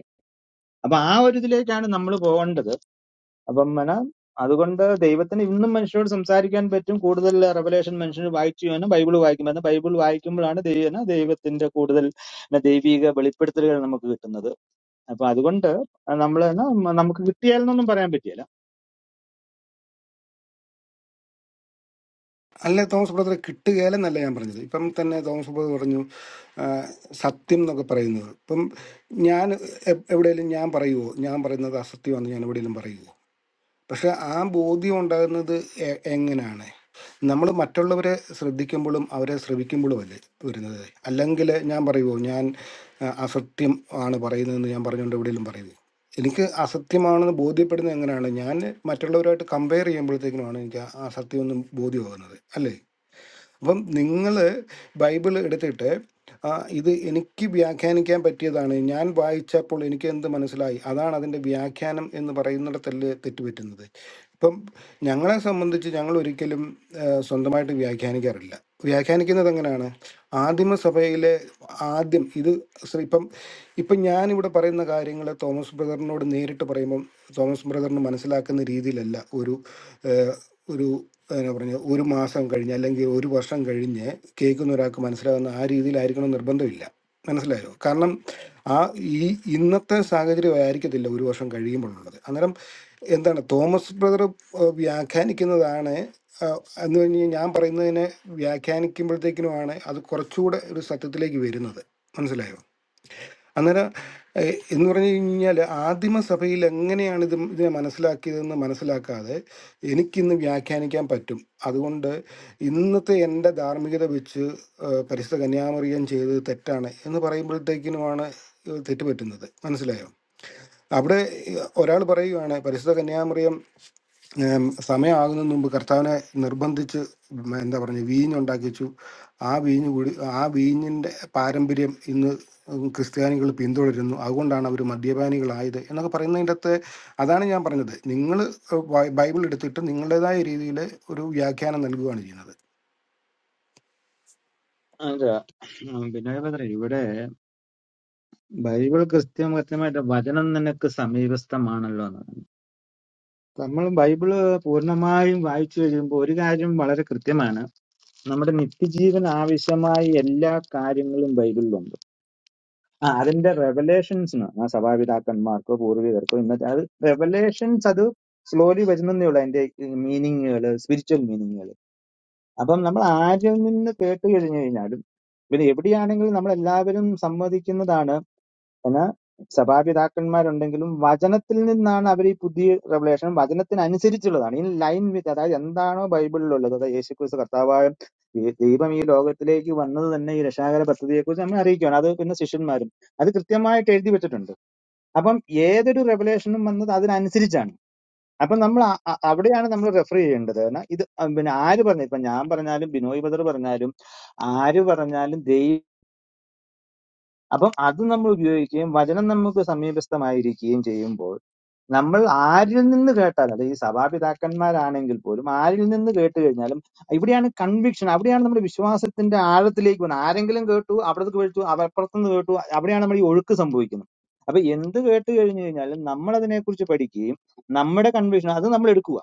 Speaker 3: അപ്പൊ ആ ഒരു ഇതിലേക്കാണ് നമ്മൾ പോകേണ്ടത് അപ്പം എന്നാ അതുകൊണ്ട് ദൈവത്തിന് ഇന്നും മനുഷ്യരോട് സംസാരിക്കാൻ പറ്റും കൂടുതൽ റെവലേഷൻ മനുഷ്യന് വായിച്ചു വേണം ബൈബിൾ വായിക്കുമ്പോൾ ബൈബിൾ വായിക്കുമ്പോഴാണ് ദൈവന ദൈവത്തിന്റെ കൂടുതൽ എന്നാ ദൈവിക വെളിപ്പെടുത്തലുകൾ നമുക്ക് കിട്ടുന്നത് അപ്പൊ അതുകൊണ്ട് നമ്മൾ നമുക്ക് കിട്ടിയാലെന്നൊന്നും പറയാൻ പറ്റിയല്ല
Speaker 1: അല്ല തോമസ് ബ്രദറെ കിട്ടുകയില്ലെന്നല്ല ഞാൻ പറഞ്ഞത് ഇപ്പം തന്നെ തോമസ് ബ്രദർ പറഞ്ഞു ആ, സത്യം എന്നൊക്കെ പറയുന്നത് ഇപ്പം ഞാൻ എ- എവിടെയെങ്കിലും ഞാൻ പറയുമോ ഞാൻ പറയുന്നത് അസത്യമാണെന്ന് ഞാൻ എവിടെയെങ്കിലും പറയുമോ പക്ഷെ ആ ബോധ്യം ഉണ്ടാകുന്നത് എ- എങ്ങനെയാണ് നമ്മൾ മറ്റുള്ളവരെ ശ്രദ്ധിക്കുമ്പോഴും അവരെ ശ്രമിക്കുമ്പോഴും അല്ലേ വരുന്നത് അല്ലെങ്കിൽ ഞാൻ പറയുമോ ഞാൻ ആ, അസത്യം ആണ് പറയുന്നതെന്ന് ഞാൻ പറഞ്ഞുകൊണ്ട് എവിടെയെങ്കിലും പറയുമോ എനിക്ക് അസത്യമാണെന്ന് ബോധ്യപ്പെടുന്നത് എങ്ങനെയാണ് ഞാൻ മറ്റുള്ളവരുമായിട്ട് കമ്പയർ ചെയ്യുമ്പോഴത്തേക്കിനുമാണ് എനിക്ക് ആ ആ സത്യം ഒന്നും ബോധ്യമാകുന്നത് അല്ലേ അപ്പം നിങ്ങൾ ബൈബിൾ എടുത്തിട്ട് ആ, ഇത് എനിക്ക് വ്യാഖ്യാനിക്കാൻ പറ്റിയതാണ് ഞാൻ വായിച്ചപ്പോൾ എനിക്ക് എന്ത് മനസ്സിലായി അതാണ് അതിൻ്റെ വ്യാഖ്യാനം എന്ന് പറയുന്നിടത്തല്ല തെറ്റുപറ്റുന്നത് ഇപ്പം ഞങ്ങളെ സംബന്ധിച്ച് ഞങ്ങൾ ഒരിക്കലും ആ, സ്വന്തമായിട്ട് വ്യാഖ്യാനിക്കാറില്ല വ്യാഖ്യാനിക്കുന്നത് എങ്ങനെയാണ് ആദിമസഭയിലെ ആദ്യം ഇത് ശ്രീ- ഇപ്പം ഇപ്പം ഞാനിവിടെ പറയുന്ന കാര്യങ്ങൾ തോമസ് ബ്രദറിനോട് നേരിട്ട് പറയുമ്പം തോമസ് ബ്രദറിന് മനസ്സിലാക്കുന്ന രീതിയിലല്ല ഒരു ഒരു എന്നാ പറഞ്ഞ ഒരു മാസം കഴിഞ്ഞ് അല്ലെങ്കിൽ ഒരു വർഷം കഴിഞ്ഞ് കേൾക്കുന്ന ഒരാൾക്ക് മനസ്സിലാകുന്ന ആ രീതിയിലായിരിക്കണം നിർബന്ധമില്ല മനസ്സിലായോ കാരണം ആ ഈ ഇന്നത്തെ സാഹചര്യം ആയിരിക്കത്തില്ല ഒരു വർഷം കഴിയുമ്പോഴുള്ളത് അന്നേരം എന്താണ് തോമസ് ബ്രദർ ഏഹ്, വ്യാഖ്യാനിക്കുന്നതാണ് ഏഹ്, എന്ന് പറഞ്ഞാൽ ഞാൻ പറയുന്നതിനെ വ്യാഖ്യാനിക്കുമ്പോഴത്തേക്കിനുമാണ് അത് കുറച്ചുകൂടെ ഒരു സത്യത്തിലേക്ക് വരുന്നത് മനസ്സിലായോ അന്നേരം ഏഹ്, എന്ന് പറഞ്ഞു കഴിഞ്ഞാൽ ആദിമസഭയിൽ എങ്ങനെയാണ് ഇത് ഇതിനെ മനസ്സിലാക്കിയതെന്ന് മനസ്സിലാക്കാതെ എനിക്കിന്ന് വ്യാഖ്യാനിക്കാൻ പറ്റും അതുകൊണ്ട് ഇന്നത്തെ എൻ്റെ ധാർമ്മികത വെച്ച് ഏഹ്, പരിശുദ്ധ കന്യാമറിയം ചെയ്തത് തെറ്റാണ് എന്ന് പറയുമ്പോഴത്തേക്കിനുമാണ് ഇത് തെറ്റ് പറ്റുന്നത് മനസ്സിലായോ അവിടെ ഒരാൾ പറയുകയാണ് പരിശുദ്ധ കന്യാമറിയം ഏം, സമയമാകുന്നതിന് മുമ്പ് കർത്താവിനെ നിർബന്ധിച്ച് ഉം എന്താ പറയുക വീഞ്ഞുണ്ടാക്കിച്ചു ആ വീഞ്ഞ് കുടി ആ വീഞ്ഞിൻ്റെ പാരമ്പര്യം ഇന്ന് ഉം, ക്രിസ്ത്യാനികൾ പിന്തുടരുന്നു അതുകൊണ്ടാണ് അവർ മദ്യപാനികളായത് എന്നൊക്കെ പറയുന്നതിൻ്റെ അകത്ത് അതാണ് ഞാൻ പറഞ്ഞത് നിങ്ങൾ ബൈബിൾ എടുത്തിട്ട് നിങ്ങളുടേതായ രീതിയിൽ ഒരു വ്യാഖ്യാനം നൽകുകയാണ് ചെയ്യുന്നത്
Speaker 3: പിന്നെ ഞാൻ പറഞ്ഞില്ലേ, ഇവിടെ ബൈബിൾ കൃത്യം കൃത്യമായിട്ട് വചനം നിനക്ക് സമീപസ്ഥമാണല്ലോ എന്ന് നമ്മൾ ബൈബിള് പൂർണ്ണമായും വായിച്ചു കഴിയുമ്പോൾ ഒരു കാര്യം വളരെ കൃത്യമാണ് നമ്മുടെ നിത്യജീവൻ ആവശ്യമായ എല്ലാ കാര്യങ്ങളും ബൈബിളിലുണ്ട് ആ അതിന്റെ റെവലേഷൻസ് ആ സഭാപിതാക്കന്മാർക്കോ പൂർവികർക്കോ ഇന്നത്തെ അത് റെവലേഷൻസ് അത് സ്ലോലി വരുന്നേ ഉള്ളൂ അതിന്റെ മീനിങ്ങുകൾ സ്പിരിച്വൽ മീനിങ്ങുകൾ അപ്പം നമ്മൾ ആരിൽ നിന്ന് കേട്ട് കഴിഞ്ഞു കഴിഞ്ഞാലും പിന്നെ എവിടെയാണെങ്കിലും നമ്മൾ എല്ലാവരും സമ്മതിക്കുന്നതാണ് എന്നാൽ സഭാപിതാക്കന്മാരുണ്ടെങ്കിലും വചനത്തിൽ നിന്നാണ് അവർ ഈ പുതിയ റെവലേഷൻ വചനത്തിനനുസരിച്ചുള്ളതാണ് ഇൻ ലൈൻ വിത്ത് അതായത് എന്താണോ ബൈബിളിലുള്ളത് അതായത് യേശുക്രിസ്തു കർത്താവായ ദൈ- ദൈവം ഈ ലോകത്തിലേക്ക് വന്നത് തന്നെ ഈ രക്ഷാകര പദ്ധതിയെക്കുറിച്ച് നമ്മൾ അറിയിക്കുകയാണ് അത് പിന്നെ ശിഷ്യന്മാരും അത് കൃത്യമായിട്ട് എഴുതി വെച്ചിട്ടുണ്ട് അപ്പം ഏതൊരു റെവലേഷനും വന്നത് അതിനനുസരിച്ചാണ് അപ്പം നമ്മൾ അ- അ- അവിടെയാണ് നമ്മൾ റെഫർ ചെയ്യേണ്ടത് കാരണം ഇത് അഹ് പിന്നെ ആര് പറഞ്ഞു ഇപ്പൊ ഞാൻ പറഞ്ഞാലും ബിനോയ് ബദർ പറഞ്ഞാലും ആര് പറഞ്ഞാലും ദൈവം അപ്പം അത് നമ്മൾ ഉപയോഗിക്കുകയും വചനം നമുക്ക് സമീപസ്ഥമായിരിക്കുകയും ചെയ്യുമ്പോൾ നമ്മൾ ആരിൽ നിന്ന് കേട്ടാലും അതായത് ഈ സഭാപിതാക്കന്മാരാണെങ്കിൽ പോലും ആരിൽ നിന്ന് കേട്ട് കഴിഞ്ഞാലും ഇവിടെയാണ് കൺവിക്ഷൻ അവിടെയാണ് നമ്മുടെ വിശ്വാസത്തിന്റെ ആഴത്തിലേക്ക് പോകുന്നത് ആരെങ്കിലും കേട്ടു അവിടത്തേക്ക് കേട്ടു അപ്പുറത്തുനിന്ന് കേട്ടു അവിടെയാണ് നമ്മൾ ഈ ഒഴുക്ക് സംഭവിക്കുന്നത് അപ്പൊ എന്ത് കേട്ട് കഴിഞ്ഞു കഴിഞ്ഞാലും നമ്മൾ അതിനെക്കുറിച്ച് പഠിക്കുകയും നമ്മുടെ കൺവിക്ഷൻ അത് നമ്മൾ എടുക്കുക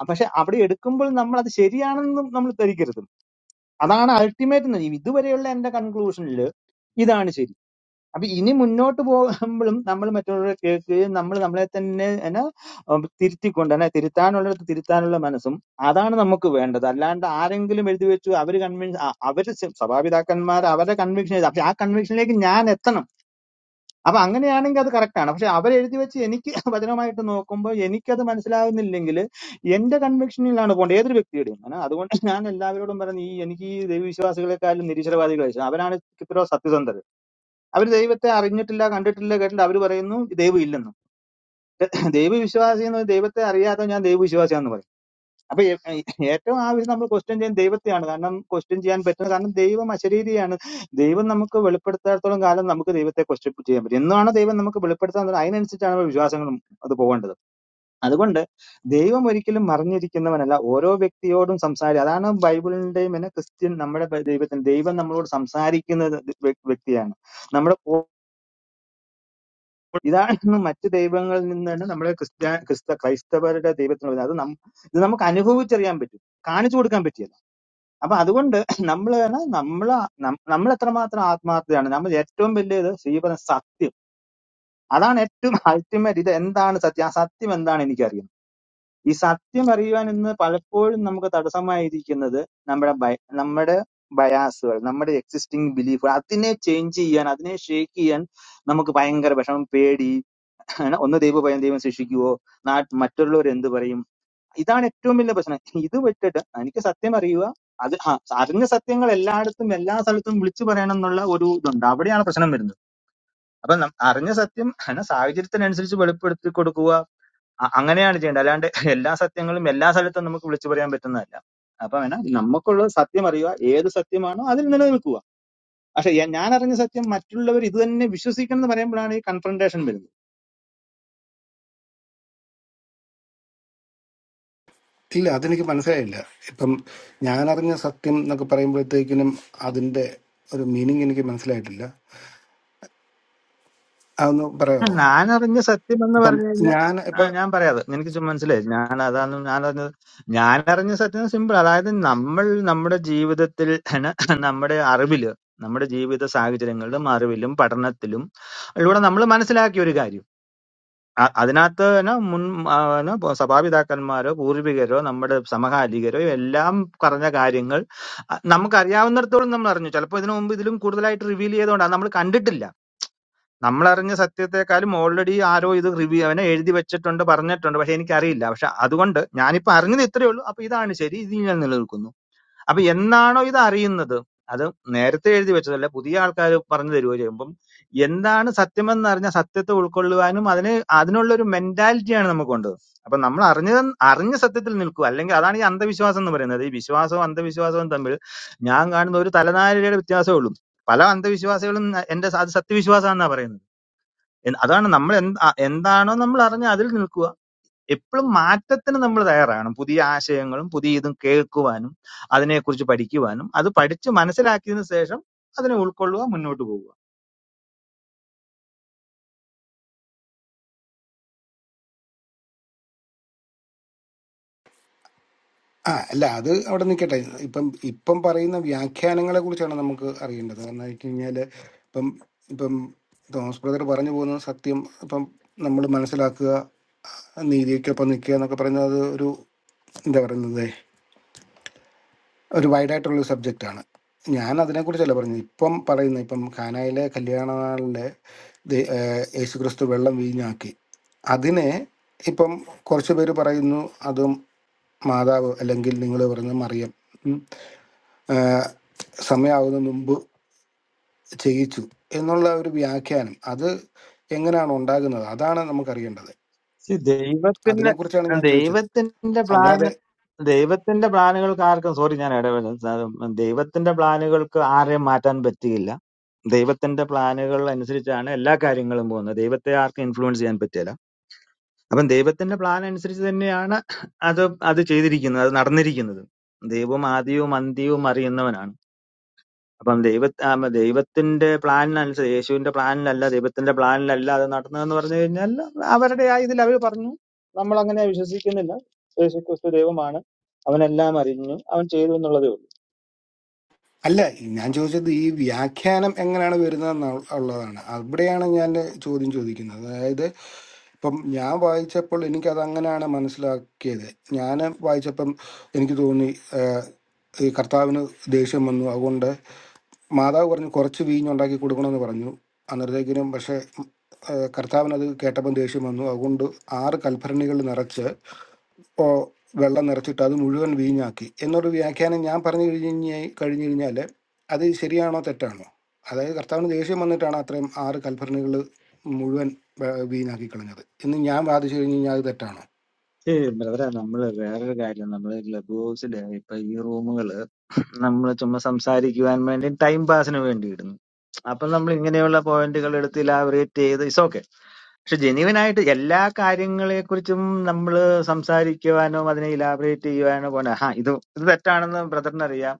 Speaker 3: അ- പക്ഷെ അവിടെ എടുക്കുമ്പോൾ നമ്മൾ അത് ശരിയാണെന്നും നമ്മൾ ധരിക്കരുത് അതാണ് അൾട്ടിമേറ്റ് ഇതുവരെയുള്ള എന്റെ കൺക്ലൂഷനിൽ ഇതാണ് ശരി അപ്പൊ ഇനി മുന്നോട്ട് പോകുമ്പോഴും നമ്മൾ മറ്റുള്ളവരെ കേൾക്കുകയും നമ്മൾ നമ്മളെ തന്നെ എന്നാ ഉം തിരുത്തിക്കൊണ്ട് എന്നാ തിരുത്താനുള്ളിടത്ത് തിരുത്താനുള്ള മനസ്സും അതാണ് നമുക്ക് വേണ്ടത് അല്ലാണ്ട് ആരെങ്കിലും എഴുതി വെച്ചു അവര് കൺവിൻസ് അവര് സ- സഭാപിതാക്കന്മാർ അവരുടെ കൺവിക്ഷൻ എഴുതി പക്ഷെ ആ കൺവിക്ഷനിലേക്ക് ഞാൻ എത്തണം അപ്പൊ അങ്ങനെയാണെങ്കിൽ അത് കറക്റ്റാണ് പക്ഷെ അവരെഴുതി വെച്ച് എനിക്ക് വചനമായിട്ട് നോക്കുമ്പോൾ എനിക്കത് മനസ്സിലാകുന്നില്ലെങ്കിൽ എന്റെ കൺവിക്ഷനിലാണ് പോകേണ്ടത് ഏതൊരു വ്യക്തിയുടെയും ആണ് അതുകൊണ്ട് ഞാൻ എല്ലാവരോടും പറഞ്ഞു ഈ എനിക്ക് ഈ ദൈവവിശ്വാസികളെക്കാളും നിരീശ്വരവാദികളെ ഇഷ്ടം. അവരാണ് ഇത്രയോ സത്യസന്ധർ അവർ ദൈവത്തെ അറിഞ്ഞിട്ടില്ല കണ്ടിട്ടില്ല കേട്ടില്ല അവർ പറയുന്നു ദൈവം ഇല്ലെന്നും ദൈവവിശ്വാസി എന്ന് പറഞ്ഞാൽ ദൈവത്തെ അറിയാതെ ഞാൻ ദൈവവിശ്വാസിയാന്ന് പറയും അപ്പൊ ഏ- ഏ- ഏറ്റവും ആവശ്യം നമ്മൾ ക്വസ്റ്റ്യൻ ചെയ്യാൻ ദൈവത്തെയാണ് കാരണം ക്വസ്റ്റ്യൻ ചെയ്യാൻ പറ്റുന്നത് കാരണം ദൈവം അശരീരിയാണ് ദൈവം നമുക്ക് വെളിപ്പെടുത്താത്തോളം കാലം നമുക്ക് ദൈവത്തെ ക്വസ്റ്റ്യൻ ചെയ്യാൻ പറ്റും എന്നാണ് ദൈവം നമുക്ക് വെളിപ്പെടുത്താൻ തന്നത് അതിനനുസരിച്ചാണ് നമ്മുടെ വിശ്വാസങ്ങളും അത് പോകേണ്ടത് അതുകൊണ്ട് ദൈവം ഒരിക്കലും മറിഞ്ഞിരിക്കുന്നവനല്ല ഓരോ വ്യക്തിയോടും സംസാരിക്കുക അതാണ് ബൈബിളിന്റെയും പിന്നെ ക്രിസ്ത്യൻ നമ്മുടെ ബൈ- ദൈവത്തിന് ദൈവം നമ്മളോട് സംസാരിക്കുന്ന വ്യ- വ്യക്തിയാണ് നമ്മുടെ ഇതാണ് മറ്റ് ദൈവങ്ങളിൽ നിന്നാണ് നമ്മുടെ ക്രിസ്ത്യ ക്രിസ്ത ക്രൈസ്തവരുടെ ദൈവത്തിന് വരുന്നത് അത് നം- ഇത് നമുക്ക് അനുഭവിച്ചറിയാൻ പറ്റും കാണിച്ചു കൊടുക്കാൻ പറ്റിയല്ല അപ്പൊ അതുകൊണ്ട് നമ്മൾ നമ്മൾ നമ്മൾ എത്രമാത്രം ആത്മാർത്ഥതയാണ് നമ്മൾ ഏറ്റവും വലിയത് ശ്രീപദം സത്യം അതാണ് ഏറ്റവും അൾട്ടിമേറ്റ് ഇത് എന്താണ് സത്യം ആ സത്യം എന്താണ് എനിക്കറിയുന്നത് ഈ സത്യം അറിയുവാൻ ഇന്ന് പലപ്പോഴും നമുക്ക് തടസ്സമായിരിക്കുന്നത് നമ്മുടെ ബയ- നമ്മുടെ ബയാസുകൾ നമ്മുടെ എക്സിസ്റ്റിംഗ് ബിലീഫുകൾ അതിനെ ചേഞ്ച് ചെയ്യാൻ അതിനെ ഷേക്ക് ചെയ്യാൻ നമുക്ക് ഭയങ്കര വിഷമം പേടി ആണ് ഒന്ന് ദൈവഭയം ദൈവം ശിക്ഷിക്കുവോ നാട്ട് മറ്റുള്ളവർ എന്ത് പറയും ഇതാണ് ഏറ്റവും വലിയ പ്രശ്നം ഇത് വിട്ടിട്ട് എനിക്ക് സത്യം അറിയുക അത് ആ, അറിഞ്ഞ സത്യങ്ങൾ എല്ലായിടത്തും എല്ലാ സ്ഥലത്തും വിളിച്ചു പറയണം എന്നുള്ള ഒരു ഇതുണ്ട് അവിടെയാണ് പ്രശ്നം വരുന്നത് അപ്പൊ നം- അറിഞ്ഞ സത്യം ആണ് സാഹചര്യത്തിനനുസരിച്ച് വെളിപ്പെടുത്തി കൊടുക്കുക അ- അങ്ങനെയാണ് ചെയ്യേണ്ടത് അല്ലാണ്ട് എല്ലാ സത്യങ്ങളും എല്ലാ സ്ഥലത്തും നമുക്ക് വിളിച്ചു പറയാൻ പറ്റുന്നതല്ല അപ്പൊ വേണം നമുക്കുള്ള സത്യം അറിയുക ഏത് സത്യമാണോ അതിൽ നിലനിൽക്കുക പക്ഷെ ഞാൻ അറിഞ്ഞ സത്യം മറ്റുള്ളവർ ഇത് തന്നെ വിശ്വസിക്കണം എന്ന് പറയുമ്പോഴാണ് ഈ കൺഫ്രണ്ടേഷൻ വരുന്നത്
Speaker 1: ഇല്ല അതെനിക്ക് മനസ്സിലായില്ല ഇപ്പം ഞാനറിഞ്ഞ സത്യം എന്നൊക്കെ പറയുമ്പോഴത്തേക്കിനും അതിൻ്റെ ഒരു മീനിങ് എനിക്ക് മനസ്സിലായിട്ടില്ല അതൊന്ന് പറയാമോ
Speaker 3: ഞാൻ അറിഞ്ഞ സത്യം എന്ന്
Speaker 1: ഇപ്പം
Speaker 3: പറഞ്ഞു കഴിഞ്ഞാൽ
Speaker 1: ഞാൻ
Speaker 3: ആ
Speaker 1: ഇപ്പം
Speaker 3: ഞാൻ പറയാതെ നിനക്ക് ചുമ്മാ മനസ്സിലായി ഞാൻ അതാണ് ഞാൻ അറിഞ്ഞത് ഞാൻ അറിഞ്ഞ സത്യം സിമ്പിൾ അതായത് നമ്മൾ നമ്മുടെ ജീവിതത്തിൽ ആണ് നമ്മുടെ അറിവില് നമ്മുടെ ജീവിത സാഹചര്യങ്ങളിലും അറിവിലും പഠനത്തിലും ഇവിടെ നമ്മൾ മനസ്സിലാക്കിയ ഒരു കാര്യം അ- അതിനകത്ത് ന മുൻ ആ, ന പ- സഭാപിതാക്കന്മാരോ പൂർവികരോ നമ്മുടെ സമകാലികരോ എല്ലാം പറഞ്ഞ കാര്യങ്ങൾ അ, നമുക്കറിയാവുന്നിടത്തോളം നമ്മൾ അറിഞ്ഞു ചിലപ്പോൾ ഇതിനു മുമ്പ് ഇതിലും കൂടുതലായിട്ട് റിവീൽ ചെയ്തുകൊണ്ടാണ് നമ്മൾ കണ്ടിട്ടില്ല നമ്മളറിഞ്ഞ സത്യത്തെക്കാളും ഓൾറെഡി ആരോ ഇത് റിവ്യൂ അവനെ എഴുതി വെച്ചിട്ടുണ്ട് പറഞ്ഞിട്ടുണ്ട് പക്ഷെ എനിക്കറിയില്ല പക്ഷെ അതുകൊണ്ട് ഞാനിപ്പോ അറിഞ്ഞത് ഇത്രയേ ഉള്ളൂ അപ്പൊ ഇതാണ് ശരി ഇത് ഞാൻ നിലനിൽക്കുന്നു അപ്പൊ എന്നാണോ ഇത് അറിയുന്നത് അത് നേരത്തെ എഴുതി വെച്ചതല്ല പുതിയ ആൾക്കാർ പറഞ്ഞു തരുവോ ചെയ്യുമ്പം എന്താണ് സത്യമെന്ന് അറിഞ്ഞ സത്യത്തെ ഉൾക്കൊള്ളുവാനും അതിന് അതിനുള്ള ഒരു മെന്റാലിറ്റിയാണ് നമുക്കുണ്ട് അപ്പൊ നമ്മൾ അറിഞ്ഞ അറിഞ്ഞ സത്യത്തിൽ നിൽക്കുക അല്ലെങ്കിൽ അതാണ് ഈ അന്ധവിശ്വാസം എന്ന് പറയുന്നത് ഈ വിശ്വാസവും അന്ധവിശ്വാസവും തമ്മിൽ ഞാൻ കാണുന്ന ഒരു തലനാരിഴയുടെ വ്യത്യാസമേ ഉള്ളൂ പല അന്ധവിശ്വാസികളും ന- എന്റെ സ- അത് സത്യവിശ്വാസമാണെന്നാ പറയുന്നത് എൻ- അതാണ് നമ്മൾ എന്ത് അ- എന്താണോ നമ്മൾ അറിഞ്ഞ അതിൽ നിൽക്കുക എപ്പോഴും മാറ്റത്തിന് നമ്മൾ തയ്യാറാകണം പുതിയ ആശയങ്ങളും പുതിയ ഇതും കേൾക്കുവാനും അതിനെക്കുറിച്ച് പഠിക്കുവാനും അത് പഠിച്ച് മനസ്സിലാക്കിയതിനു ശേഷം അതിനെ ഉൾക്കൊള്ളുക മുന്നോട്ട് പോകുക
Speaker 1: ആ അല്ല അത് അവിടെ നിൽക്കട്ടെ ഇപ്പം ഇപ്പം പറയുന്ന വ്യാഖ്യാനങ്ങളെ കുറിച്ചാണ് നമുക്ക് അറിയേണ്ടത് കാരണം എന്ന് വെച്ച് കഴിഞ്ഞാൽ ഇപ്പം ഇപ്പം തോമസ് ബ്രദർ പറഞ്ഞു പോകുന്ന സത്യം ഇപ്പം നമ്മൾ മനസ്സിലാക്കുക നീതിക്കൊപ്പം നിൽക്കുക എന്നൊക്കെ പറയുന്നത് അത് ഒരു എന്താ പറയുന്നത് ഒരു വൈഡായിട്ടുള്ളൊരു സബ്ജക്റ്റാണ് ഞാൻ അതിനെക്കുറിച്ചല്ല പറഞ്ഞത് ഇപ്പം പറയുന്ന ഇപ്പം കാനായിലെ കല്യാണ നാളിലെ ദേ- ഏഹ് യേശുക്രിസ്തു വെള്ളം വീഞ്ഞാക്കി അതിനെ ഇപ്പം കുറച്ച് പേര് പറയുന്നു അതും മാതാവ് അല്ലെങ്കിൽ നിങ്ങൾ പറഞ്ഞ മറിയം ഉം, ഏഹ് സമയാവുന്നതിന് മുമ്പ് ചെയ്യിച്ചു എന്നുള്ള ഒരു വ്യാഖ്യാനം അത് എങ്ങനെയാണ് ഉണ്ടാകുന്നത് അതാണ് നമുക്കറിയേണ്ടത്
Speaker 3: See, ദൈവത്തിന്റെ
Speaker 1: അതിനെക്കുറിച്ചാണ് ഞാൻ ചോദിച്ചത്
Speaker 3: ദൈവത്തിന്റെ പ്ലാൻ
Speaker 1: അല്ലാതെ
Speaker 3: ദൈവത്തിന്റെ പ്ലാനുകൾക്ക് ആർക്കും സോറി ഞാൻ ഇടപെടുന്നത് ദൈവത്തിന്റെ പ്ലാനുകൾക്ക് ആരെയും മാറ്റാൻ പറ്റിയില്ല ദൈവത്തിന്റെ പ്ലാനുകൾ അനുസരിച്ചാണ് എല്ലാ കാര്യങ്ങളും പോകുന്നത് ദൈവത്തെ ആർക്കും ഇൻഫ്ലുവൻസ് ചെയ്യാൻ പറ്റില്ല അപ്പം ദൈവത്തിന്റെ പ്ലാൻ അനുസരിച്ച് തന്നെയാണ് അത് അത് ചെയ്തിരിക്കുന്നത് അത് നടന്നിരിക്കുന്നത് ദൈവവും ആദ്യവും അന്ത്യവും അറിയുന്നവനാണ് അപ്പം ദൈവ ആ, ദൈവത്തിന്റെ പ്ലാനിനനുസരിച്ച് യേശുവിന്റെ പ്ലാനിലല്ല ദൈവത്തിന്റെ പ്ലാനിലല്ല അത് നടന്നതെന്ന് പറഞ്ഞു കഴിഞ്ഞാൽ അവരുടെ ആ ഇതിൽ അവർ പറഞ്ഞു നമ്മൾ അങ്ങനെ വിശ്വസിക്കുന്നില്ല യേശു ക്രിസ്തു ദൈവമാണ് അവനെല്ലാം അറിഞ്ഞു അവൻ ചെയ്തു എന്നുള്ളതേ ഉള്ളൂ
Speaker 1: അല്ല ഞാൻ ചോദിച്ചത് ഈ വ്യാഖ്യാനം എങ്ങനെയാണ് വരുന്നതെന്ന് ഉള്ളതാണ് അവിടെയാണ് ഞാൻ ചോദ്യം ചോദിക്കുന്നത് അതായത് ഇപ്പം ഞാൻ വായിച്ചപ്പോൾ എനിക്കത് അങ്ങനെയാണ് മനസ്സിലാക്കിയത് ഞാൻ വായിച്ചപ്പം എനിക്ക് തോന്നി ആഹ്, ഈ കർത്താവിന് ദേഷ്യം വന്നു അതുകൊണ്ട് മാതാവ് പറഞ്ഞു കുറച്ച് വീഞ്ഞുണ്ടാക്കി കൊടുക്കണമെന്ന് പറഞ്ഞു അന്നേരത്തേക്കിനും പക്ഷേ കർത്താവിനത് കേട്ടപ്പം ദേഷ്യം വന്നു അതുകൊണ്ട് ആറ് കൽഭരണികൾ നിറച്ച് ഓ, വെള്ളം നിറച്ചിട്ട് അത് മുഴുവൻ വീഞ്ഞാക്കി എന്നൊരു വ്യാഖ്യാനം ഞാൻ പറഞ്ഞു കഴിഞ്ഞ് കഴിഞ്ഞു കഴിഞ്ഞാൽ അത് ശരിയാണോ തെറ്റാണോ അതായത് കർത്താവിന് ദേഷ്യം വന്നിട്ടാണ് അത്രയും ആറ് കൽഭരണികൾ മുഴുവൻ വെ- വീഞ്ഞാക്കി കളഞ്ഞത് എന്ന് ഞാൻ വാദിച്ചു കഴിഞ്ഞ് കഴിഞ്ഞാൽ അത് തെറ്റാണോ
Speaker 3: ഏയ് ബ്രദറെ നമ്മള് വേറൊരു കാര്യം നമ്മള് ക്ലബ് ഹൗസില് ഇപ്പൊ ഈ റൂമുകള് നമ്മള് ചുമ്മാ സംസാരിക്കുവാൻ വേണ്ടി ടൈം പാസിന് വേണ്ടി ഇടുന്നു അപ്പൊ നമ്മൾ ഇങ്ങനെയുള്ള പോയിന്റുകൾ എടുത്ത് ഇലാബറേറ്റ് ചെയ്ത് ഇറ്റ്സ് ഓക്കെ പക്ഷെ ജെന്യുവൻ ആയിട്ട് എല്ലാ കാര്യങ്ങളെ കുറിച്ചും നമ്മൾ സംസാരിക്കുവാനോ അതിനെ ഇലാബറേറ്റ് ചെയ്യുവാനോ പോണ ഹാ ഇത് ഇത് തെറ്റാണെന്ന് ബ്രദറിന് അറിയാം